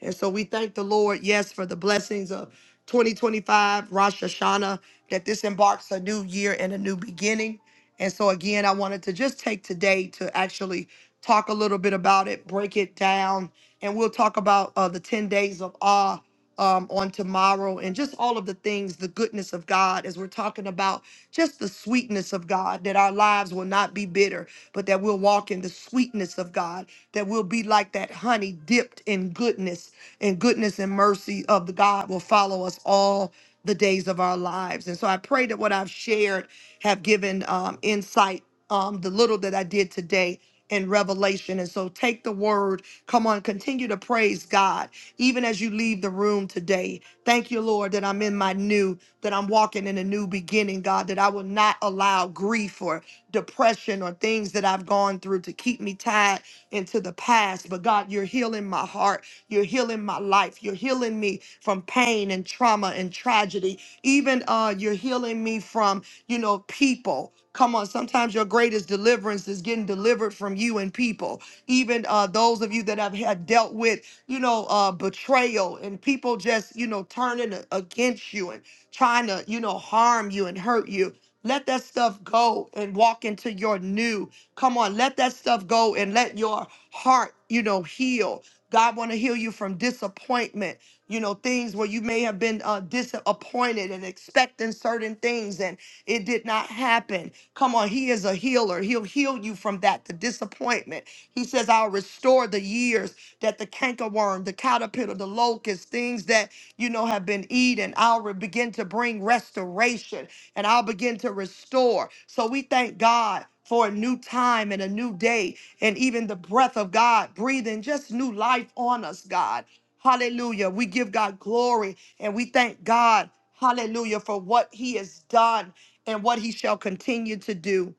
[SPEAKER 1] And so we thank the Lord, yes, for the blessings of 2025, Rosh Hashanah, that this embarks a new year and a new beginning. And so, again, I wanted to just take today to actually talk a little bit about it, break it down, and we'll talk about uh, the 10 days of awe um, on tomorrow and just all of the things, the goodness of God, as we're talking about just the sweetness of God, that our lives will not be bitter, but that we'll walk in the sweetness of God, that we'll be like that honey dipped in goodness and goodness and mercy of the God will follow us all the days of our lives. And so I pray that what I've shared have given um, insight, um, the little that I did today in Revelation. And so take the word. Come on, continue to praise God, even as you leave the room today. Thank you, Lord, that I'm in my new, that I'm walking in a new beginning, God, that I will not allow grief or depression or things that I've gone through to keep me tied into the past. But God, you're healing my heart. You're healing my life. You're healing me from pain and trauma and tragedy. Even uh, you're healing me from, you know, people. Come on, sometimes your greatest deliverance is getting delivered from you and people. Even uh, those of you that have had dealt with, you know, uh, betrayal and people just, you know, turning a- against you and trying to, you know, harm you and hurt you. Let that stuff go and walk into your new. Come on, let that stuff go and let your heart, you know, heal God want to heal you from disappointment, you know, things where you may have been uh, disappointed and expecting certain things and it did not happen. Come on, He is a healer. He'll heal you from that, the disappointment. He says, I'll restore the years that the cankerworm, the caterpillar, the locust, things that, you know, have been eaten. I'll re- begin to bring restoration and I'll begin to restore. So we thank God for a new time and a new day and even the breath of God breathing just new life on us, God. Hallelujah. We give God glory and we thank God, hallelujah, for what he has done and what he shall continue to do.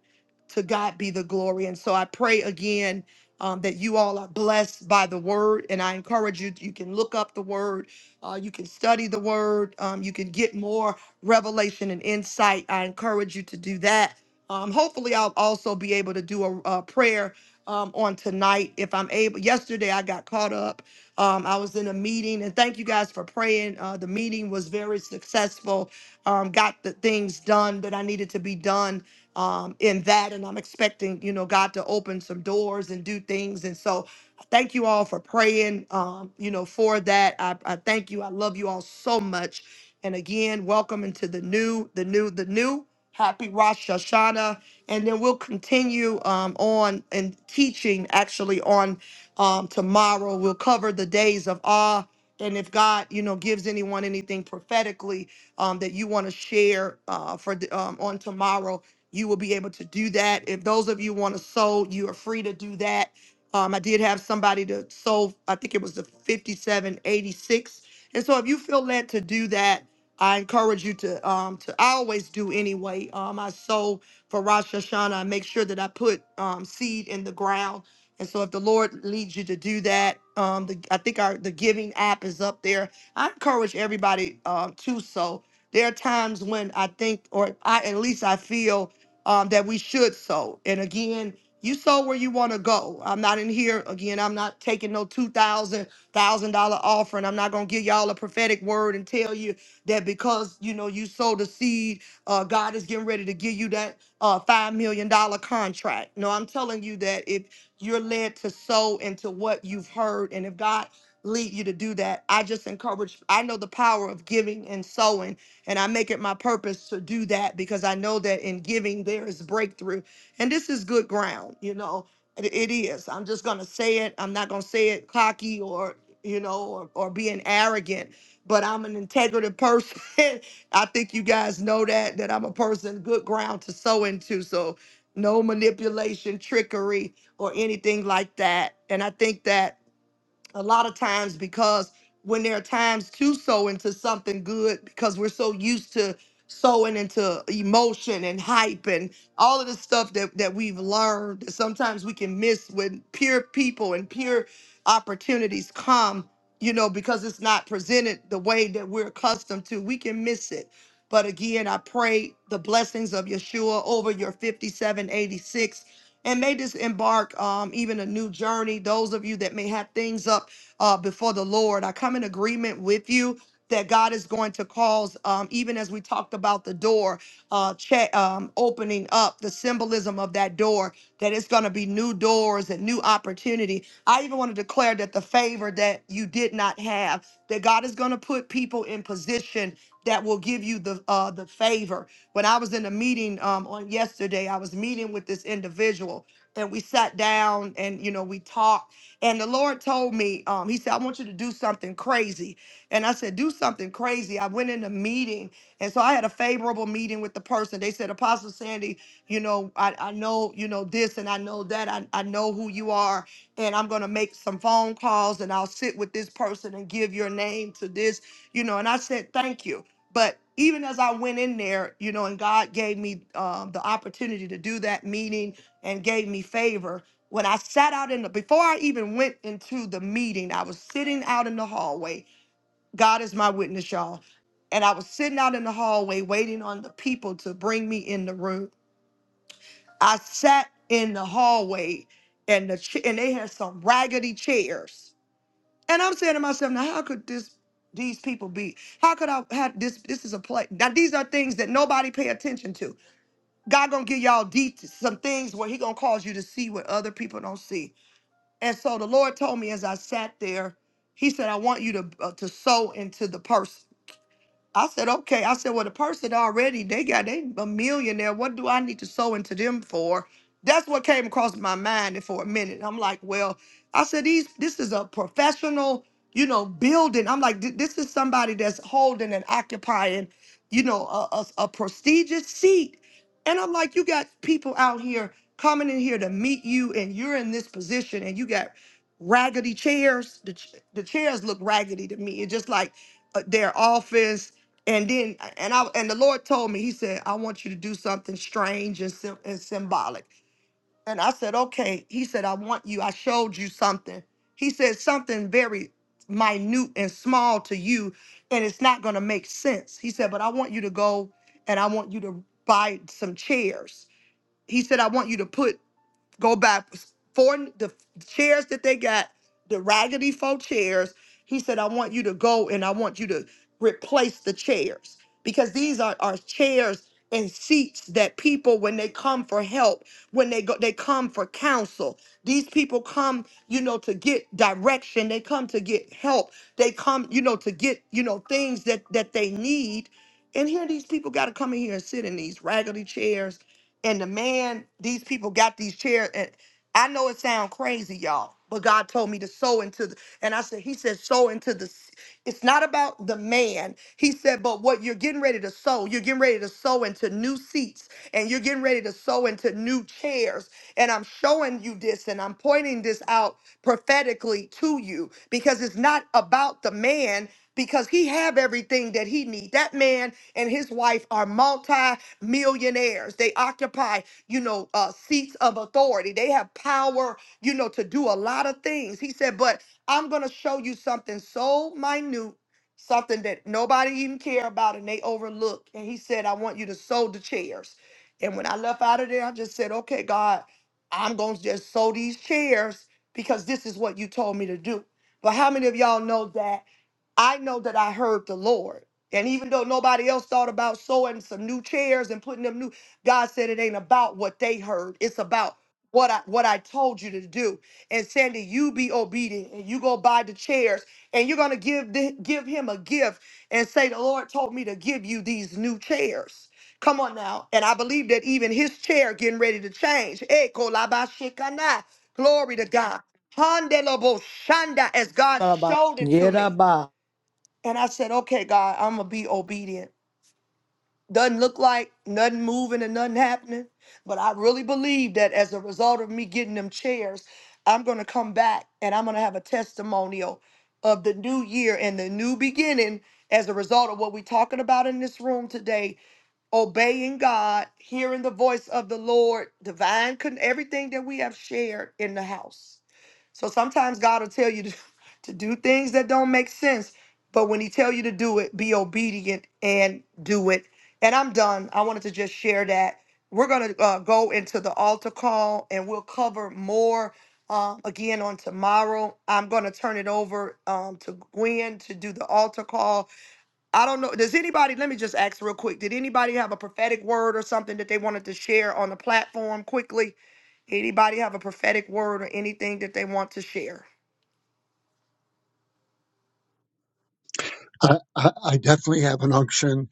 [SPEAKER 1] To God be the glory. And so I pray again um, that you all are blessed by the word. And I encourage you, you can look up the word, uh, you can study the word, um, you can get more revelation and insight. I encourage you to do that. Um, hopefully, I'll also be able to do a, a prayer um, on tonight if I'm able. Yesterday, I got caught up. Um, I was in a meeting, and thank you guys for praying. Uh, the meeting was very successful. Um, got the things done that I needed to be done um, in that, and I'm expecting, you know, God to open some doors and do things. And so, thank you all for praying. Um, you know, for that, I, I thank you. I love you all so much. And again, welcome into the new, the new, the new. Happy Rosh Hashanah and then we'll continue um, on and teaching actually on um, tomorrow. We'll cover the days of awe. And if God, you know, gives anyone anything prophetically um, that you want to share uh, for the, um, on tomorrow, you will be able to do that. If those of you want to sow, you are free to do that. Um, I did have somebody to sow. I think it was the fifty-seven eighty-six. And so, if you feel led to do that, I encourage you to um, to I always do anyway. Um, I sow for Rosh Hashanah. I make sure that I put um, seed in the ground. And so if the Lord leads you to do that, um, the, I think our the giving app is up there. I encourage everybody um, to sow. There are times when I think, or I at least I feel um, that we should sow. And again, you sow where you want to go. I'm not in here again. I'm not taking no two thousand thousand dollar offering. I'm not gonna give y'all a prophetic word and tell you that because you know you sow the seed, uh, God is getting ready to give you that uh, $5 million dollars contract. No, I'm telling you that if you're led to sow into what you've heard, and if God lead you to do that, I just encourage, I know the power of giving and sowing, and I make it my purpose to do that because I know that in giving there is breakthrough. And this is good ground, you know, it it is. I'm just going to say it. I'm not going to say it cocky or, you know, or, or being arrogant but I'm an integrative person I think you guys know that that I'm a person good ground to sow into. So no manipulation, trickery, or anything like that. And I think that a lot of times because when there are times to sow into something good because we're so used to sowing into emotion and hype and all of the stuff that, that we've learned that sometimes we can miss when pure people and pure opportunities come you know because it's not presented the way that we're accustomed to we can miss it but again i pray the blessings of yeshua over your 5786 and may this embark um, even a new journey. Those of you that may have things up uh, before the Lord. I come in agreement with you that God is going to cause, um, even as we talked about the door uh, cha- um, opening up, the symbolism of that door, that it's going to be new doors and new opportunity. I even want to declare that the favor that you did not have, that God is going to put people in position that will give you the uh, the favor. When I was in a meeting um, on yesterday, I was meeting with this individual, and we sat down and you know we talked and the Lord told me, um, He said, I want you to do something crazy. And I said, Do something crazy. I went in a meeting. And so I had a favorable meeting with the person. They said, Apostle Sandy, you know, I, I know, you know, this and I know that. I, I know who you are. And I'm going to make some phone calls and I'll sit with this person and give your name to this, you know. And I said, Thank you. But even as I went in there, you know, and God gave me um, the opportunity to do that meeting and gave me favor when I sat out in the before I even went into the meeting, I was sitting out in the hallway. God is my witness, y'all. And I was sitting out in the hallway waiting on the people to bring me in the room. I sat in the hallway and the ch- and they had some raggedy chairs. And I'm saying to myself, now how could this these people be? How could I have this? This is a play. Now these are things that nobody pay attention to. God gonna give y'all de- some things where He gonna cause you to see what other people don't see. And so the Lord told me as I sat there, He said, I want you to, uh, to sow into the person. I said, okay. I said, well, the person already, they got they a millionaire. What do I need to sew into them for? That's what came across my mind and for a minute. I'm like, well, I said, these this is a professional, you know, building. I'm like, "Th- this is somebody that's holding and occupying, you know, a, a, a prestigious seat. And I'm like, you got people out here coming in here to meet you, and you're in this position, and you got raggedy chairs. The, ch- the chairs look raggedy to me. It's just like uh, their office and then, and I, and the Lord told me, He said, I want you to do something strange and, sym- and symbolic. And I said, okay. He said, I want you, I showed you something. He said, something very minute and small to you, and it's not going to make sense. He said, but I want you to go and I want you to buy some chairs. He said, I want you to put go back four the chairs that they got, the raggedy four chairs. He said, I want you to go and I want you to replace the chairs because these are, are chairs and seats that people when they come for help when they go they come for counsel these people come you know to get direction they come to get help they come you know to get you know things that that they need and here these people got to come in here and sit in these raggedy chairs and the man these people got these chairs and i know it sound crazy y'all but god told me to sow into the and i said he said sow into the s- it's not about the man he said but what you're getting ready to sow you're getting ready to sow into new seats and you're getting ready to sow into new chairs and i'm showing you this and i'm pointing this out prophetically to you because it's not about the man because he have everything that he need that man and his wife are multi millionaires. They occupy, you know, uh, seats of authority. They have power, you know, to do a lot of things. He said, but I'm going to show you something so minute, something that nobody even care about and they overlook. And he said, I want you to sow the chairs. And when I left out of there, I just said, okay, God, I'm going to just sow these chairs because this is what you told me to do. But how many of y'all know that? I know that I heard the Lord. And even though nobody else thought about sewing some new chairs and putting them new, God said it ain't about what they heard. It's about what I what I told you to do. And Sandy, you be obedient and you go buy the chairs and you're gonna give the, give him a gift and say, The Lord told me to give you these new chairs. Come on now. And I believe that even his chair getting ready to change. Eh, kolabashikana. Glory to God. Handelabo shanda as God
[SPEAKER 10] Yaraba-
[SPEAKER 1] showed it to me.
[SPEAKER 10] Yaraba.
[SPEAKER 1] And I said, okay, God, I'm going to be obedient. Doesn't look like nothing moving and nothing happening. But I really believe that as a result of me getting them chairs, I'm going to come back and I'm going to have a testimonial of the new year and the new beginning as a result of what we're talking about in this room today obeying God, hearing the voice of the Lord, divine, con- everything that we have shared in the house. So sometimes God will tell you to, to do things that don't make sense, but when he tell you to do it, be obedient and do it. And I'm done. I wanted to just share that. We're going to uh, go into the altar call and we'll cover more uh, again on tomorrow. I'm going to turn it over um, to Gwen to do the altar call I don't know. Does anybody, let me just ask real quick, did anybody have a prophetic word or something that they wanted to share on the platform quickly? Anybody have a prophetic word or anything that they want to share?
[SPEAKER 8] I, I, I definitely have an unction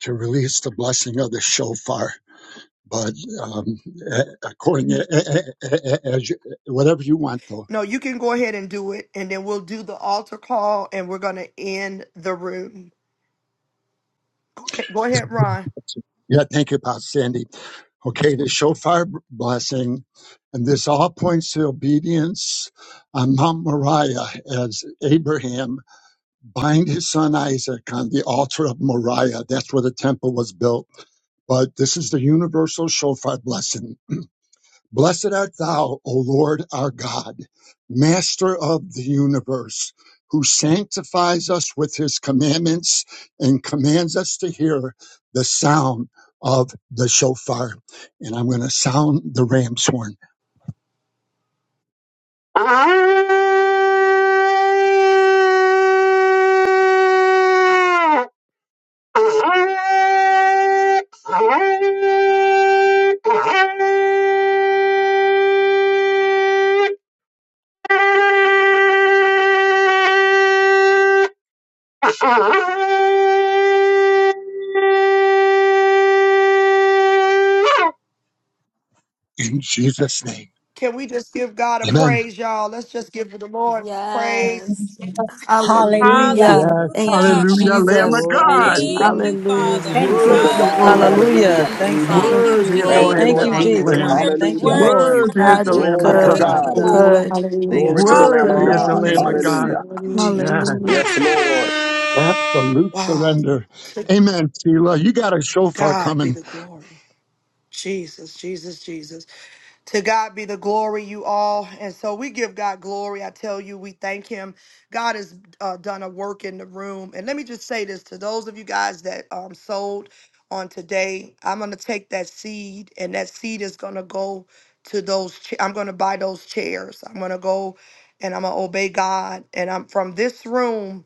[SPEAKER 8] to release the blessing of the shofar, but um, a- according a- a- a- a- as you, whatever you want, though.
[SPEAKER 1] No, you can go ahead and do it, and then we'll do the altar call and we're going to end the room. Go ahead, go ahead, Ron.
[SPEAKER 8] Yeah, thank you, Pastor Sandy. Okay, the shofar blessing, and this all points to obedience on Mount Moriah as Abraham bind his son Isaac on the altar of Moriah. That's where the temple was built. But this is the universal shofar blessing. Blessed art thou, O Lord our God, master of the universe, who sanctifies us with his commandments and commands us to hear the sound of the shofar. And I'm going to sound the ram's horn. In Jesus' name.
[SPEAKER 1] Can we just give God a
[SPEAKER 8] Amen.
[SPEAKER 1] praise, y'all? Let's just give the Lord praise.
[SPEAKER 2] Yes.
[SPEAKER 3] Hallelujah.
[SPEAKER 8] Yes,
[SPEAKER 2] Hallelujah. Thank you,
[SPEAKER 4] Hallelujah.
[SPEAKER 8] hallelujah, Lamb
[SPEAKER 2] Jesus.
[SPEAKER 8] of
[SPEAKER 22] Glory
[SPEAKER 8] God.
[SPEAKER 22] to
[SPEAKER 18] Hallelujah.
[SPEAKER 4] Thank you,
[SPEAKER 22] the
[SPEAKER 2] Hallelujah,
[SPEAKER 22] Lamb.
[SPEAKER 3] Thank
[SPEAKER 4] Father.
[SPEAKER 18] Glory
[SPEAKER 3] you,
[SPEAKER 2] Jesus.
[SPEAKER 18] to
[SPEAKER 21] the
[SPEAKER 8] Worthy
[SPEAKER 3] Lord.
[SPEAKER 8] is the
[SPEAKER 18] God.
[SPEAKER 21] Lord.
[SPEAKER 8] Lamb.
[SPEAKER 21] Praise
[SPEAKER 15] Hallelujah.
[SPEAKER 18] Hallelujah.
[SPEAKER 4] Hallelujah.
[SPEAKER 21] the Lord.
[SPEAKER 15] Thank you.
[SPEAKER 22] Hallelujah.
[SPEAKER 4] Thank
[SPEAKER 2] Thank
[SPEAKER 4] you,
[SPEAKER 8] Worthy
[SPEAKER 2] you,
[SPEAKER 8] is the
[SPEAKER 18] Thank you,
[SPEAKER 8] Lamb
[SPEAKER 4] Jesus.
[SPEAKER 2] Lord.
[SPEAKER 15] Thank
[SPEAKER 8] that
[SPEAKER 18] Lord
[SPEAKER 15] you,
[SPEAKER 8] was
[SPEAKER 2] My
[SPEAKER 22] Thank
[SPEAKER 18] Jesus.
[SPEAKER 22] you,
[SPEAKER 8] slain.
[SPEAKER 15] Jesus.
[SPEAKER 22] thank
[SPEAKER 2] God,
[SPEAKER 22] you,
[SPEAKER 4] Worthy,
[SPEAKER 15] Thank you,
[SPEAKER 18] Hallelujah.
[SPEAKER 22] thank
[SPEAKER 4] worthy,
[SPEAKER 15] Lord.
[SPEAKER 2] Jesus.
[SPEAKER 22] you,
[SPEAKER 8] Worthy
[SPEAKER 22] Father.
[SPEAKER 8] is the
[SPEAKER 2] God, you're
[SPEAKER 4] worthy.
[SPEAKER 8] Lamb
[SPEAKER 18] Glory
[SPEAKER 8] of
[SPEAKER 15] Thank
[SPEAKER 22] All
[SPEAKER 15] you,
[SPEAKER 18] to
[SPEAKER 22] things,
[SPEAKER 2] good.
[SPEAKER 8] God.
[SPEAKER 4] Thank
[SPEAKER 15] Father
[SPEAKER 18] God.
[SPEAKER 4] you,
[SPEAKER 15] God.
[SPEAKER 13] Hallelujah.
[SPEAKER 4] Lord.
[SPEAKER 2] Good.
[SPEAKER 13] Hallelujah.
[SPEAKER 18] Glory
[SPEAKER 22] things,
[SPEAKER 18] to
[SPEAKER 2] You're
[SPEAKER 18] the Lamb of
[SPEAKER 8] Worthy
[SPEAKER 2] good,
[SPEAKER 8] is
[SPEAKER 4] Hallelujah.
[SPEAKER 22] all
[SPEAKER 8] the
[SPEAKER 15] Thank
[SPEAKER 18] God.
[SPEAKER 15] you,
[SPEAKER 8] Lamb of
[SPEAKER 22] things
[SPEAKER 15] Jesus.
[SPEAKER 2] Jesus.
[SPEAKER 22] new
[SPEAKER 8] God.
[SPEAKER 18] Hallelujah.
[SPEAKER 22] in
[SPEAKER 13] Hallelujah.
[SPEAKER 8] Yeah,
[SPEAKER 22] Jesus' name.
[SPEAKER 2] Hallelujah.
[SPEAKER 18] Yes, Lord.
[SPEAKER 8] absolute
[SPEAKER 1] Wow,
[SPEAKER 8] surrender.
[SPEAKER 1] to
[SPEAKER 8] Amen, Sheila. You got a shofar
[SPEAKER 1] God
[SPEAKER 8] coming.
[SPEAKER 1] be the glory. Jesus, Jesus, Jesus. To God be the glory, you all. And so we give God glory. I tell you, we thank Him. God has uh, done a work in the room. And let me just say this to those of you guys that um, sold on today, I'm going to take that seed, and that seed is going to go to those. Cha- I'm going to buy those chairs. I'm going to go and I'm going to obey God. And I'm from this room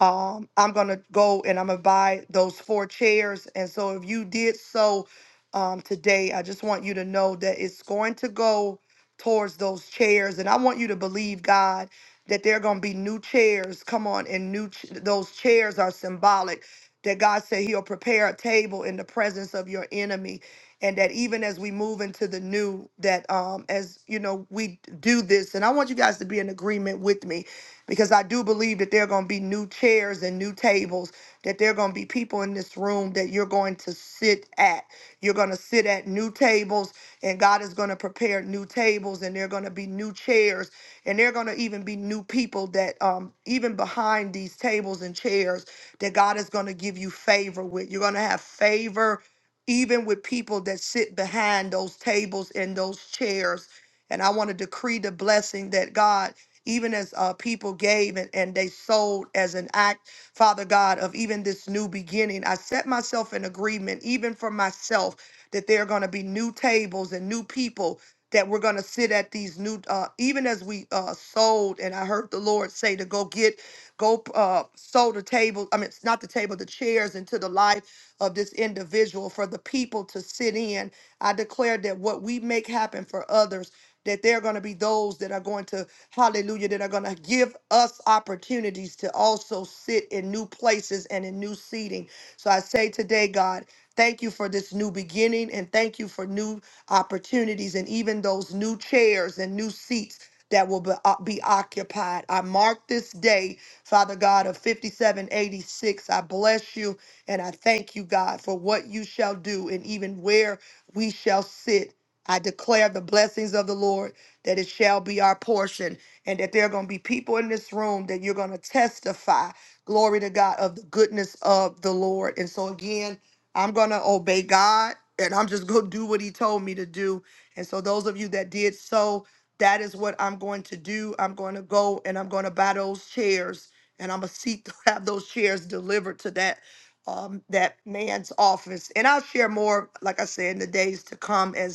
[SPEAKER 1] um, I'm gonna go and I'm gonna buy those four chairs. And so if you did so um, today, I just want you to know that it's going to go towards those chairs. And I want you to believe God that there are gonna be new chairs. Come on, and new ch- those chairs are symbolic. That God said He'll prepare a table in the presence of your enemy, and that even as we move into the new, that um, as you know we do this, and I want you guys to be in agreement with me because I do believe that there are going to be new chairs and new tables, that there are going to be people in this room that you're going to sit at. You're going to sit at new tables, and God is going to prepare new tables, and there are going to be new chairs, and there are going to even be new people that, um, even behind these tables and chairs, that God is going to give you favor with. You're going to have favor even with people that sit behind those tables and those chairs. And I want to decree the blessing that God even as uh, people gave and, and they sold as an act, Father God, of even this new beginning. I set myself in agreement, even for myself, that there are going to be new tables and new people that we're going to sit at these new, uh, even as we uh, sold. And I heard the Lord say to go get, go uh, sow the table. I mean, it's not the table, the chairs into the life of this individual for the people to sit in. I declare that what we make happen for others that there are going to be those that are going to Hallelujah. That are going to give us opportunities to also sit in new places and in new seating. So I say today, God, thank you for this new beginning and thank you for new opportunities and even those new chairs and new seats that will be, uh, be occupied. I mark this day, Father God, of 5786. I bless you and I thank you, God, for what you shall do and even where we shall sit. I declare the blessings of the Lord that it shall be our portion and that there are going to be people in this room that you're going to testify, glory to God, of the goodness of the Lord. And so, again, I'm going to obey God and I'm just going to do what He told me to do. And so, those of you that did so, that is what I'm going to do. I'm going to go and I'm going to buy those chairs and I'm going to seek to have those chairs delivered to that um, that man's office. And I'll share more, like I said, in the days to come as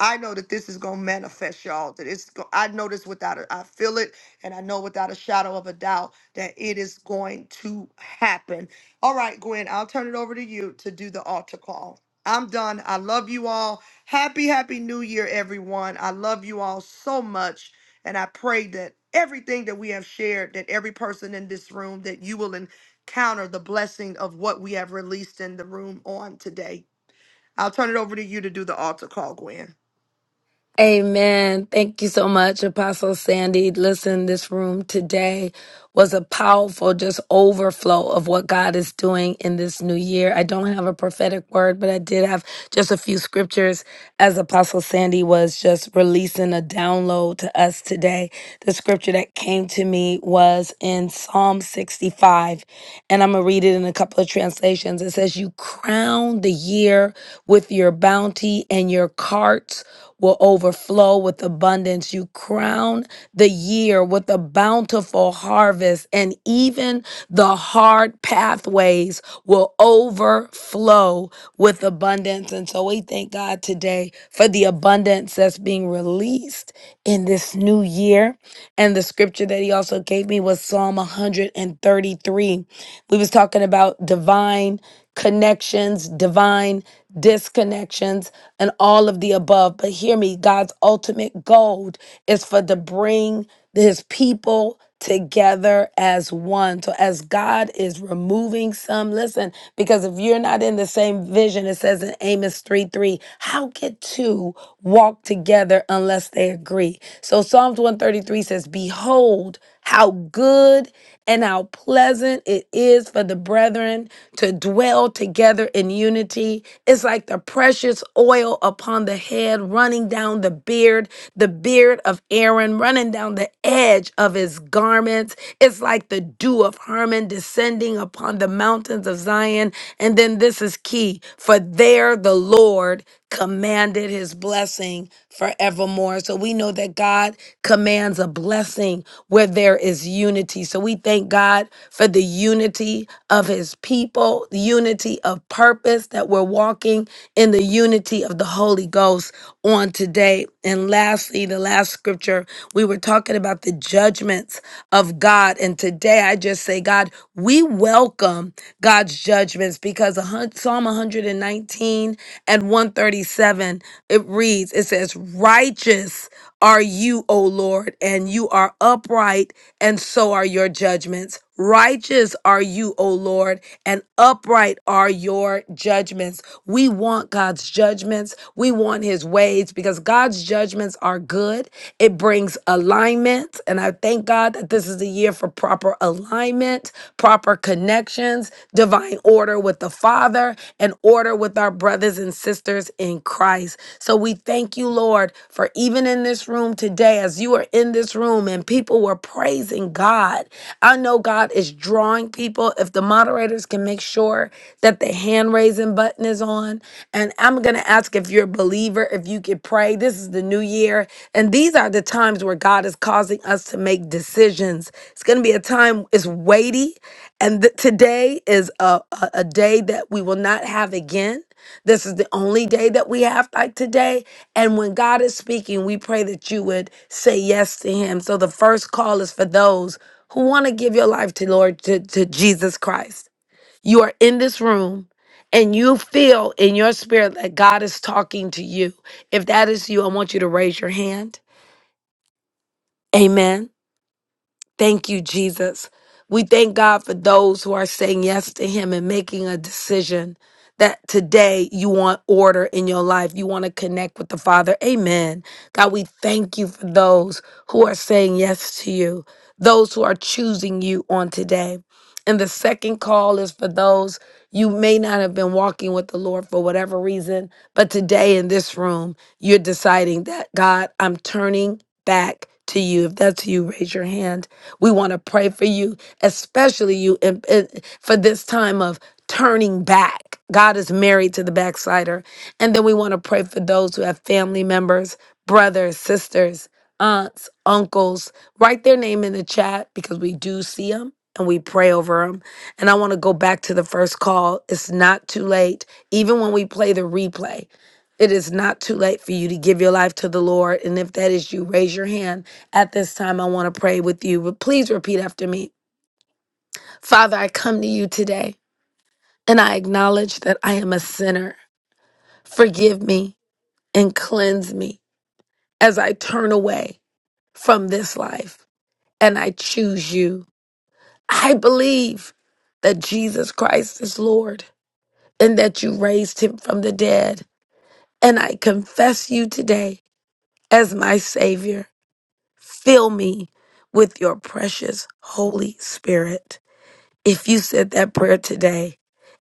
[SPEAKER 1] I know that this is gonna manifest, y'all. That it's go- I know this without a I feel it, and I know without a shadow of a doubt that it is going to happen. All right, Gwen, I'll turn it over to you to do the altar call. I'm done. I love you all. Happy, happy new year, everyone. I love you all so much. And I pray that everything that we have shared, that every person in this room, that you will encounter the blessing of what we have released in the room on today. I'll turn it over to you to do the altar call, Gwen.
[SPEAKER 2] Amen. Thank you so much, Apostle Sandy. Listen, this room today was a powerful just overflow of what God is doing in this new year. I don't have a prophetic word, but I did have just a few scriptures as Apostle Sandy was just releasing a download to us today. The scripture that came to me was in Psalm 65, and I'm going to read it in a couple of translations. It says, You crown the year with your bounty and your carts." will overflow with abundance. You crown the year with a bountiful harvest, and even the hard pathways will overflow with abundance. And so we thank God today for the abundance that's being released in this new year. And the scripture that he also gave me was Psalm 133. We was talking about divine connections, divine disconnections and all of the above. But hear me, God's ultimate goal is for to bring his people together as one. So as God is removing some, listen, because if you're not in the same vision, it says in Amos 3 3, how could two walk together unless they agree? So Psalms 133 says, Behold, how good and how pleasant it is for the brethren to dwell together in unity. It's like the precious oil upon the head, running down the beard, the beard of Aaron, running down the edge of his garments. It's like the dew of Hermon descending upon the mountains of Zion. And then this is key for there the Lord commanded his blessing forevermore. So we know that God commands a blessing where there is unity. So we thank God for the unity of his people, the unity of purpose that we're walking in the unity of the Holy Ghost on today. And lastly, the last scripture, we were talking about the judgments of God. And today I just say, God, we welcome God's judgments because a hun- Psalm 119 and 137, it reads, it says, Righteous are you, O Lord, and you are upright and so are your judgments. Righteous are you, O Lord, and upright are your judgments. We want God's judgments. We want his ways because God's judgments are good. It brings alignment. And I thank God that this is a year for proper alignment, proper connections divine order with the Father and order with our brothers and sisters in Christ. So we thank you, Lord, for even in this room today, as you are in this room and people were praising God. I know God is drawing people. If the moderators can make sure that the hand raising button is on. And I'm going to ask if you're a believer, if you could pray. This is the new year. And these are the times where God is causing us to make decisions. It's going to be a time, it's weighty. And th- today is a, a, a day that we will not have again. This is the only day that we have like today. And when God is speaking, we pray that you would say yes to Him. So the first call is for those who want to give your life to Lord, to, to Jesus Christ. You are in this room and you feel in your spirit that God is talking to you. If that is you, I want you to raise your hand. Amen. Thank you, Jesus. We thank God for those who are saying yes to Him and making a decision that today you want order in your life. You want to connect with the Father. Amen. God, we thank you for those who are saying yes to you, those who are choosing you on today. And the second call is for those you may not have been walking with the Lord for whatever reason, but today in this room, you're deciding that, God, I'm turning back to you. If that's you, raise your hand we want to pray for you, especially you, in, in- for this time of turning back. God is married to the backslider. And then we want to pray for those who have family members, brothers, sisters, aunts, uncles. Write their name in the chat because we do see them and we pray over them. And I want to go back to the first call. It's not too late, even when we play the replay. It is not too late for you to give your life to the Lord. And if that is you, raise your hand at this time, I want to pray with you, but please repeat after me. Father, I come to you today and I acknowledge that I am a sinner. Forgive me and cleanse me as I turn away from this life and I choose you. I believe that Jesus Christ is Lord and that you raised him from the dead. And I confess you today as my Savior. Fill me with your precious Holy Spirit. If you said that prayer today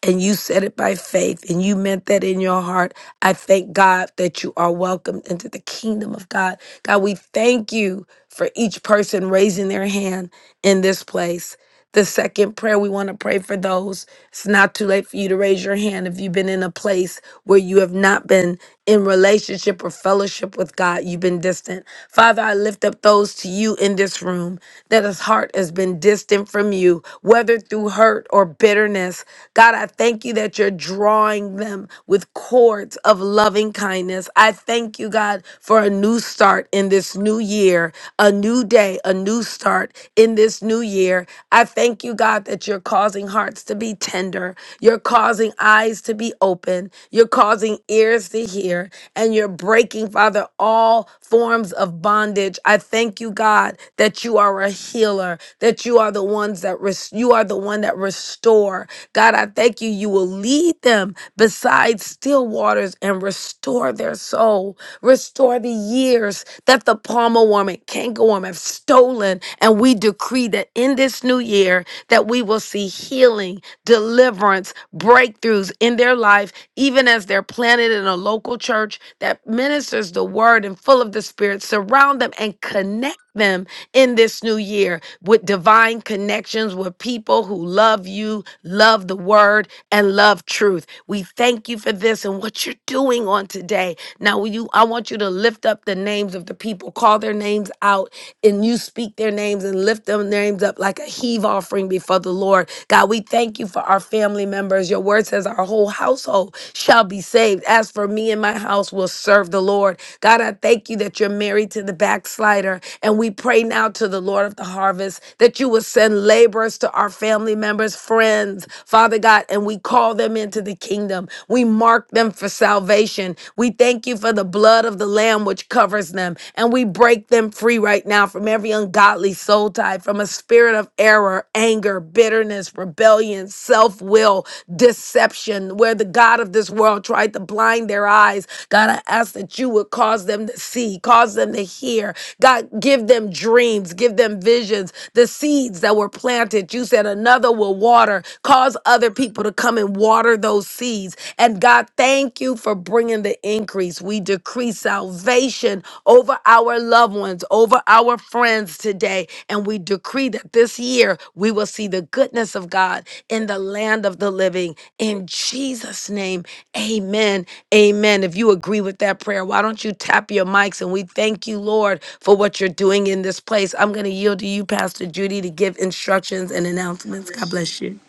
[SPEAKER 2] and you said it by faith and you meant that in your heart, I thank God that you are welcomed into the kingdom of God. God, we thank you for each person raising their hand in this place. The second prayer we want to pray for those. It's not too late for you to raise your hand if you've been in a place where you have not been in relationship or fellowship with God. You've been distant. Father, I lift up those to you in this room that his heart has been distant from you, whether through hurt or bitterness. God, I thank you that you're drawing them with cords of loving kindness. I thank you, God, for a new start in this new year, a new day, a new start in this new year. I thank you, God, that you're causing hearts to be tender. You're causing eyes to be open. You're causing ears to hear. And you're breaking, Father, all forms of bondage. I thank you, God, that you are a healer, that you are the ones that res- you are the one that restore. God, I thank you. You will lead them beside still waters and restore their soul. Restore the years that the palmer worm and cankerworm have stolen. And we decree that in this new year that we will see healing, deliverance, breakthroughs in their life, even as they're planted in a local church that ministers the word and full of the spirit. Surround them and connect them in this new year with divine connections with people who love you, love the word, and love truth. We thank you for this and what you're doing on today. Now, you, I want you to lift up the names of the people, call their names out and you speak their names and lift them names up like a heave offering before the Lord. God, we thank you for our family members. Your word says our whole household shall be saved. As for me and my house will serve the Lord. God, I thank you that you're married to the backslider. And we pray now to the Lord of the harvest that you will send laborers to our family members, friends, Father God, and we call them into the kingdom. We mark them for salvation. We thank you for the blood blood of the Lamb which covers them. And we break them free right now from every ungodly soul tie, from a spirit of error, anger, bitterness, rebellion, self will, deception, where the God of this world tried to blind their eyes. God, I ask that you would cause them to see, cause them to hear. God, give them dreams, give them visions. The seeds that were planted, you said another will water. Cause other people to come and water those seeds and God, thank you for bringing the increase. We decree salvation over our loved ones, over our friends today. And we decree that this year we will see the goodness of God in the land of the living. In Jesus' name, amen. Amen. If you agree with that prayer, why don't you tap your mics and we thank you, Lord, for what you're doing in this place. I'm going to yield to you, Pastor Judy, to give instructions and announcements. God
[SPEAKER 23] Hallelujah.
[SPEAKER 2] bless you.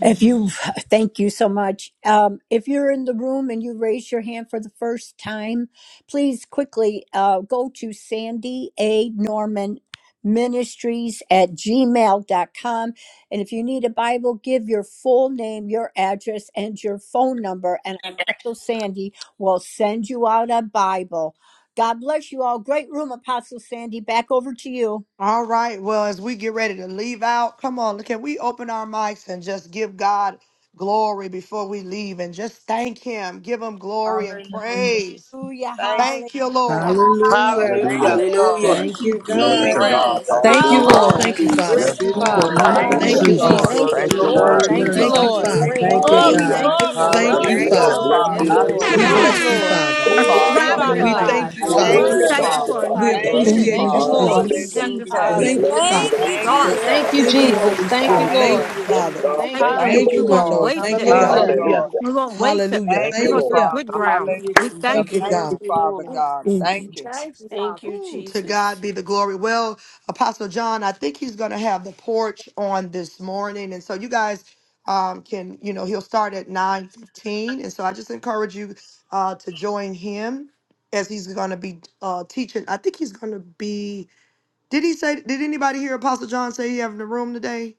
[SPEAKER 3] If you thank you so much. Um, if you're in the room and you raise your hand for the first time, please quickly uh, go to Sandy A. Norman Ministries at Gmail dot com. And if you need a Bible, give your full name, your address, and your phone number. And
[SPEAKER 32] Okay.
[SPEAKER 3] Apostle Sandy will send you out a Bible. God bless you all. Great room, Apostle Sandy. Back over to you.
[SPEAKER 1] All right. Well, as we get ready to leave out, come on, can we open our mics and just give God glory before we leave and just thank Him? Give Him glory and
[SPEAKER 14] Hallelujah.
[SPEAKER 1] praise.
[SPEAKER 3] Hallelujah.
[SPEAKER 14] Thank you.
[SPEAKER 1] Thank you,
[SPEAKER 3] Hallelujah.
[SPEAKER 1] Lord.
[SPEAKER 24] Hallelujah.
[SPEAKER 14] Thank
[SPEAKER 7] Hallelujah.
[SPEAKER 18] Hallelujah.
[SPEAKER 14] you,
[SPEAKER 4] Hallelujah.
[SPEAKER 25] Hallelujah.
[SPEAKER 14] Lord.
[SPEAKER 24] Thank
[SPEAKER 4] Thank
[SPEAKER 24] you,
[SPEAKER 4] you,
[SPEAKER 14] You're
[SPEAKER 18] Glory
[SPEAKER 14] so
[SPEAKER 24] God.
[SPEAKER 18] to
[SPEAKER 7] Thank you,
[SPEAKER 14] great.
[SPEAKER 18] God.
[SPEAKER 4] Jesus.
[SPEAKER 14] You're
[SPEAKER 7] Jesus.
[SPEAKER 15] Thank
[SPEAKER 14] so
[SPEAKER 15] you,
[SPEAKER 18] Hallelujah.
[SPEAKER 25] Thank
[SPEAKER 14] awesome,
[SPEAKER 15] Lord.
[SPEAKER 25] you,
[SPEAKER 10] Thank you,
[SPEAKER 24] Yes,
[SPEAKER 14] Lord.
[SPEAKER 25] Jesus.
[SPEAKER 4] Hallelujah.
[SPEAKER 24] the
[SPEAKER 15] Thank
[SPEAKER 18] Yes,
[SPEAKER 10] Father.
[SPEAKER 15] you,
[SPEAKER 24] beautiful
[SPEAKER 18] Lord.
[SPEAKER 15] Father.
[SPEAKER 2] Hallelujah,
[SPEAKER 14] Thank
[SPEAKER 24] morning,
[SPEAKER 18] Hallelujah.
[SPEAKER 15] Thank
[SPEAKER 10] Thank you,
[SPEAKER 14] you,
[SPEAKER 15] you,
[SPEAKER 17] Hallelujah.
[SPEAKER 28] Hallelujah.
[SPEAKER 14] Lord.
[SPEAKER 2] Jesus.
[SPEAKER 10] Father.
[SPEAKER 28] Thank
[SPEAKER 17] Thank
[SPEAKER 7] Glory
[SPEAKER 28] you,
[SPEAKER 18] Thank
[SPEAKER 15] Jesus.
[SPEAKER 14] You
[SPEAKER 7] to
[SPEAKER 17] you,
[SPEAKER 14] are
[SPEAKER 18] you,
[SPEAKER 24] beautiful
[SPEAKER 18] Lord
[SPEAKER 17] Jesus.
[SPEAKER 7] God.
[SPEAKER 28] Lord,
[SPEAKER 14] worthy,
[SPEAKER 17] Thank
[SPEAKER 15] Thank
[SPEAKER 28] for
[SPEAKER 15] you,
[SPEAKER 18] Jesus.
[SPEAKER 10] Thank
[SPEAKER 14] Lord.
[SPEAKER 10] you,
[SPEAKER 24] room.
[SPEAKER 28] such a
[SPEAKER 15] Lord.
[SPEAKER 4] Glory,
[SPEAKER 17] you,
[SPEAKER 14] Thank
[SPEAKER 10] Father.
[SPEAKER 28] great
[SPEAKER 14] you,
[SPEAKER 24] Thank you,
[SPEAKER 14] Jesus.
[SPEAKER 28] day.
[SPEAKER 4] glory,
[SPEAKER 18] Hallelujah.
[SPEAKER 17] Jesus.
[SPEAKER 24] God.
[SPEAKER 28] Thank
[SPEAKER 15] Thank
[SPEAKER 28] you
[SPEAKER 15] you,
[SPEAKER 4] glory,
[SPEAKER 28] for
[SPEAKER 15] Lord.
[SPEAKER 18] Yes,
[SPEAKER 10] Thank you,
[SPEAKER 28] loving
[SPEAKER 4] glory,
[SPEAKER 28] us
[SPEAKER 14] Thank
[SPEAKER 17] Hallelujah.
[SPEAKER 14] you,
[SPEAKER 7] Hallelujah.
[SPEAKER 18] Lord.
[SPEAKER 28] so
[SPEAKER 10] Father.
[SPEAKER 17] Glory.
[SPEAKER 18] Bless
[SPEAKER 14] Father.
[SPEAKER 18] you,
[SPEAKER 15] Yes,
[SPEAKER 14] I
[SPEAKER 24] Thank
[SPEAKER 4] glory.
[SPEAKER 18] Lord
[SPEAKER 24] you,
[SPEAKER 15] Lord.
[SPEAKER 14] bless
[SPEAKER 10] We
[SPEAKER 17] Hallelujah.
[SPEAKER 3] Hallelujah.
[SPEAKER 14] you,
[SPEAKER 15] Thank
[SPEAKER 18] Jesus.
[SPEAKER 24] God.
[SPEAKER 15] you,
[SPEAKER 28] mm,
[SPEAKER 10] bless
[SPEAKER 14] Lord.
[SPEAKER 10] you,
[SPEAKER 15] Lord.
[SPEAKER 14] Thank
[SPEAKER 4] Hallelujah.
[SPEAKER 14] you,
[SPEAKER 10] Father.
[SPEAKER 17] We
[SPEAKER 18] Oh,
[SPEAKER 4] Thank
[SPEAKER 17] bless
[SPEAKER 4] you,
[SPEAKER 2] Thank
[SPEAKER 15] Thank
[SPEAKER 17] your
[SPEAKER 14] Father.
[SPEAKER 18] hallelujah.
[SPEAKER 15] you,
[SPEAKER 4] Father
[SPEAKER 17] holy
[SPEAKER 10] We
[SPEAKER 24] Thank you,
[SPEAKER 28] extravagantly.
[SPEAKER 17] name,
[SPEAKER 15] Father.
[SPEAKER 4] God.
[SPEAKER 10] thank
[SPEAKER 24] thank
[SPEAKER 10] you,
[SPEAKER 4] You're
[SPEAKER 24] you,
[SPEAKER 17] Jesus.
[SPEAKER 14] Thank
[SPEAKER 24] thank
[SPEAKER 10] Father.
[SPEAKER 18] Oh,
[SPEAKER 15] Thank
[SPEAKER 28] We
[SPEAKER 18] we
[SPEAKER 15] you,
[SPEAKER 14] you,
[SPEAKER 17] We
[SPEAKER 24] you.
[SPEAKER 25] Hallelujah.
[SPEAKER 4] worthy,
[SPEAKER 28] thank
[SPEAKER 18] thank
[SPEAKER 28] you
[SPEAKER 18] you,
[SPEAKER 15] Father.
[SPEAKER 28] for
[SPEAKER 14] Father.
[SPEAKER 4] Lord.
[SPEAKER 28] a new
[SPEAKER 18] God.
[SPEAKER 4] We
[SPEAKER 10] We
[SPEAKER 17] magnify
[SPEAKER 14] Thank
[SPEAKER 17] your
[SPEAKER 4] thank
[SPEAKER 7] Glory
[SPEAKER 14] you,
[SPEAKER 7] to
[SPEAKER 28] beginning.
[SPEAKER 17] name.
[SPEAKER 7] your
[SPEAKER 2] you,
[SPEAKER 10] appreciate
[SPEAKER 15] Thank
[SPEAKER 4] you.
[SPEAKER 10] you,
[SPEAKER 15] you,
[SPEAKER 14] Father.
[SPEAKER 7] name.
[SPEAKER 4] Thank
[SPEAKER 15] Lord.
[SPEAKER 10] Father.
[SPEAKER 4] you,
[SPEAKER 28] We
[SPEAKER 2] Jesus.
[SPEAKER 18] Hallelujah.
[SPEAKER 28] thank you
[SPEAKER 14] Hallelujah.
[SPEAKER 18] We
[SPEAKER 24] Thank
[SPEAKER 4] Jesus.
[SPEAKER 24] you,
[SPEAKER 10] Thank you,
[SPEAKER 18] bless
[SPEAKER 24] Jesus.
[SPEAKER 18] you,
[SPEAKER 28] for a
[SPEAKER 17] Hallelujah,
[SPEAKER 4] Thank
[SPEAKER 10] Father.
[SPEAKER 18] Lord
[SPEAKER 4] you,
[SPEAKER 14] Thank
[SPEAKER 17] Jesus.
[SPEAKER 3] Oh,
[SPEAKER 28] start.
[SPEAKER 14] you,
[SPEAKER 18] Jesus.
[SPEAKER 14] Lord.
[SPEAKER 15] Thank
[SPEAKER 17] Thank
[SPEAKER 15] you,
[SPEAKER 4] Jesus.
[SPEAKER 17] you,
[SPEAKER 10] Thank
[SPEAKER 28] We
[SPEAKER 10] you,
[SPEAKER 15] Jesus.
[SPEAKER 10] Holy
[SPEAKER 17] Lord.
[SPEAKER 15] Thank
[SPEAKER 18] Hallelujah.
[SPEAKER 3] God.
[SPEAKER 15] you,
[SPEAKER 7] Thank
[SPEAKER 10] Spirit.
[SPEAKER 7] you,
[SPEAKER 14] Thank
[SPEAKER 7] Lord.
[SPEAKER 10] Thank
[SPEAKER 15] Lord.
[SPEAKER 14] you,
[SPEAKER 10] you,
[SPEAKER 17] Hallelujah,
[SPEAKER 18] Yes,
[SPEAKER 10] Father.
[SPEAKER 17] Jesus.
[SPEAKER 18] God.
[SPEAKER 14] Jesus.
[SPEAKER 28] thank
[SPEAKER 15] Thank
[SPEAKER 18] Thank
[SPEAKER 15] you.
[SPEAKER 18] you,
[SPEAKER 28] and
[SPEAKER 14] Thank
[SPEAKER 10] Thank
[SPEAKER 28] we
[SPEAKER 10] you,
[SPEAKER 14] you,
[SPEAKER 18] Lord.
[SPEAKER 17] Hallelujah,
[SPEAKER 10] my
[SPEAKER 28] won't
[SPEAKER 17] Jesus.
[SPEAKER 14] Lord.
[SPEAKER 10] Lord.
[SPEAKER 28] waste
[SPEAKER 10] Thank
[SPEAKER 28] it,
[SPEAKER 10] you,
[SPEAKER 14] Thank
[SPEAKER 17] Thank
[SPEAKER 10] God.
[SPEAKER 14] you,
[SPEAKER 28] Lord.
[SPEAKER 15] Hallelujah.
[SPEAKER 17] you,
[SPEAKER 7] Hallelujah.
[SPEAKER 14] Lord.
[SPEAKER 17] Lord.
[SPEAKER 18] Hallelujah.
[SPEAKER 28] We won't waste it
[SPEAKER 10] Hallelujah.
[SPEAKER 18] Thank
[SPEAKER 14] Thank
[SPEAKER 18] you,
[SPEAKER 10] Thank
[SPEAKER 14] you,
[SPEAKER 28] because
[SPEAKER 18] Lord.
[SPEAKER 28] we're
[SPEAKER 10] you.
[SPEAKER 14] Father.
[SPEAKER 28] good ground.
[SPEAKER 17] Hallelujah,
[SPEAKER 28] We
[SPEAKER 14] Hallelujah.
[SPEAKER 28] thank
[SPEAKER 10] Thank
[SPEAKER 17] Jesus.
[SPEAKER 28] you,
[SPEAKER 10] you,
[SPEAKER 14] Thank
[SPEAKER 17] Thank
[SPEAKER 28] Lord.
[SPEAKER 10] God.
[SPEAKER 14] you,
[SPEAKER 17] you,
[SPEAKER 14] Father
[SPEAKER 17] Lord.
[SPEAKER 28] Mm,
[SPEAKER 14] God.
[SPEAKER 2] Thank you.
[SPEAKER 14] Thank you.
[SPEAKER 28] Thank you,
[SPEAKER 17] Thank
[SPEAKER 28] Father.
[SPEAKER 17] you,
[SPEAKER 1] Ooh, to
[SPEAKER 17] Jesus.
[SPEAKER 1] God be the glory. Well, Apostle John, I think he's going to have the porch on this morning. And so you guys um, can, you know, he'll start at 9.15. And so I just encourage you uh, to join him as he's going to be uh, teaching. I think he's going to be Did he say? Did anybody hear Apostle John say he having a room today?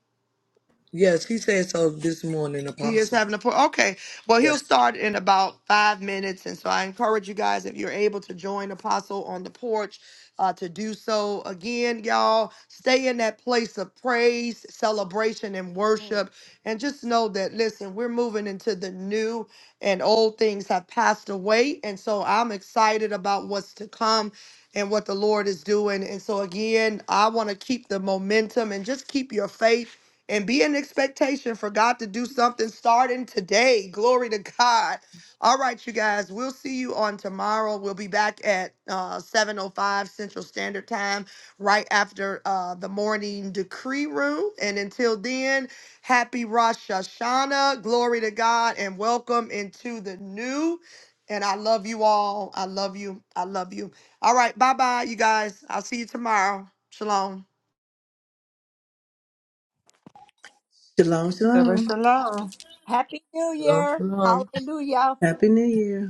[SPEAKER 10] Yes, he said so this morning,
[SPEAKER 1] He is
[SPEAKER 10] Apostle.
[SPEAKER 1] having a poor. Okay. Well, he'll
[SPEAKER 10] Yes.
[SPEAKER 1] start in about five minutes. And so I encourage you guys, if you're able to join Apostle on the porch, uh, to do so. Again, y'all, stay in that place of praise, celebration, and
[SPEAKER 28] Mm,
[SPEAKER 1] worship. And just know that, listen, we're moving into the new and old things have passed away. And so I'm excited about what's to come and what the Lord is doing. And so, again, I want to keep the momentum and just keep your faith and be an expectation for God to do something starting today. Glory to God. All right, you guys, we'll see you on tomorrow. We'll be back at uh, 7.05 Central Standard Time right after uh, the morning decree room. And until then, happy Rosh Hashanah. Glory to God and welcome into the new. And I love you all. I love you. I love you. All right, bye-bye, you guys. I'll see you tomorrow. Shalom.
[SPEAKER 24] Shalom,
[SPEAKER 14] Shalom,
[SPEAKER 24] shalom.
[SPEAKER 14] shalom.
[SPEAKER 3] Happy New
[SPEAKER 7] Shalom,
[SPEAKER 3] Year.
[SPEAKER 7] shalom.
[SPEAKER 3] Hallelujah.
[SPEAKER 24] Happy New Year.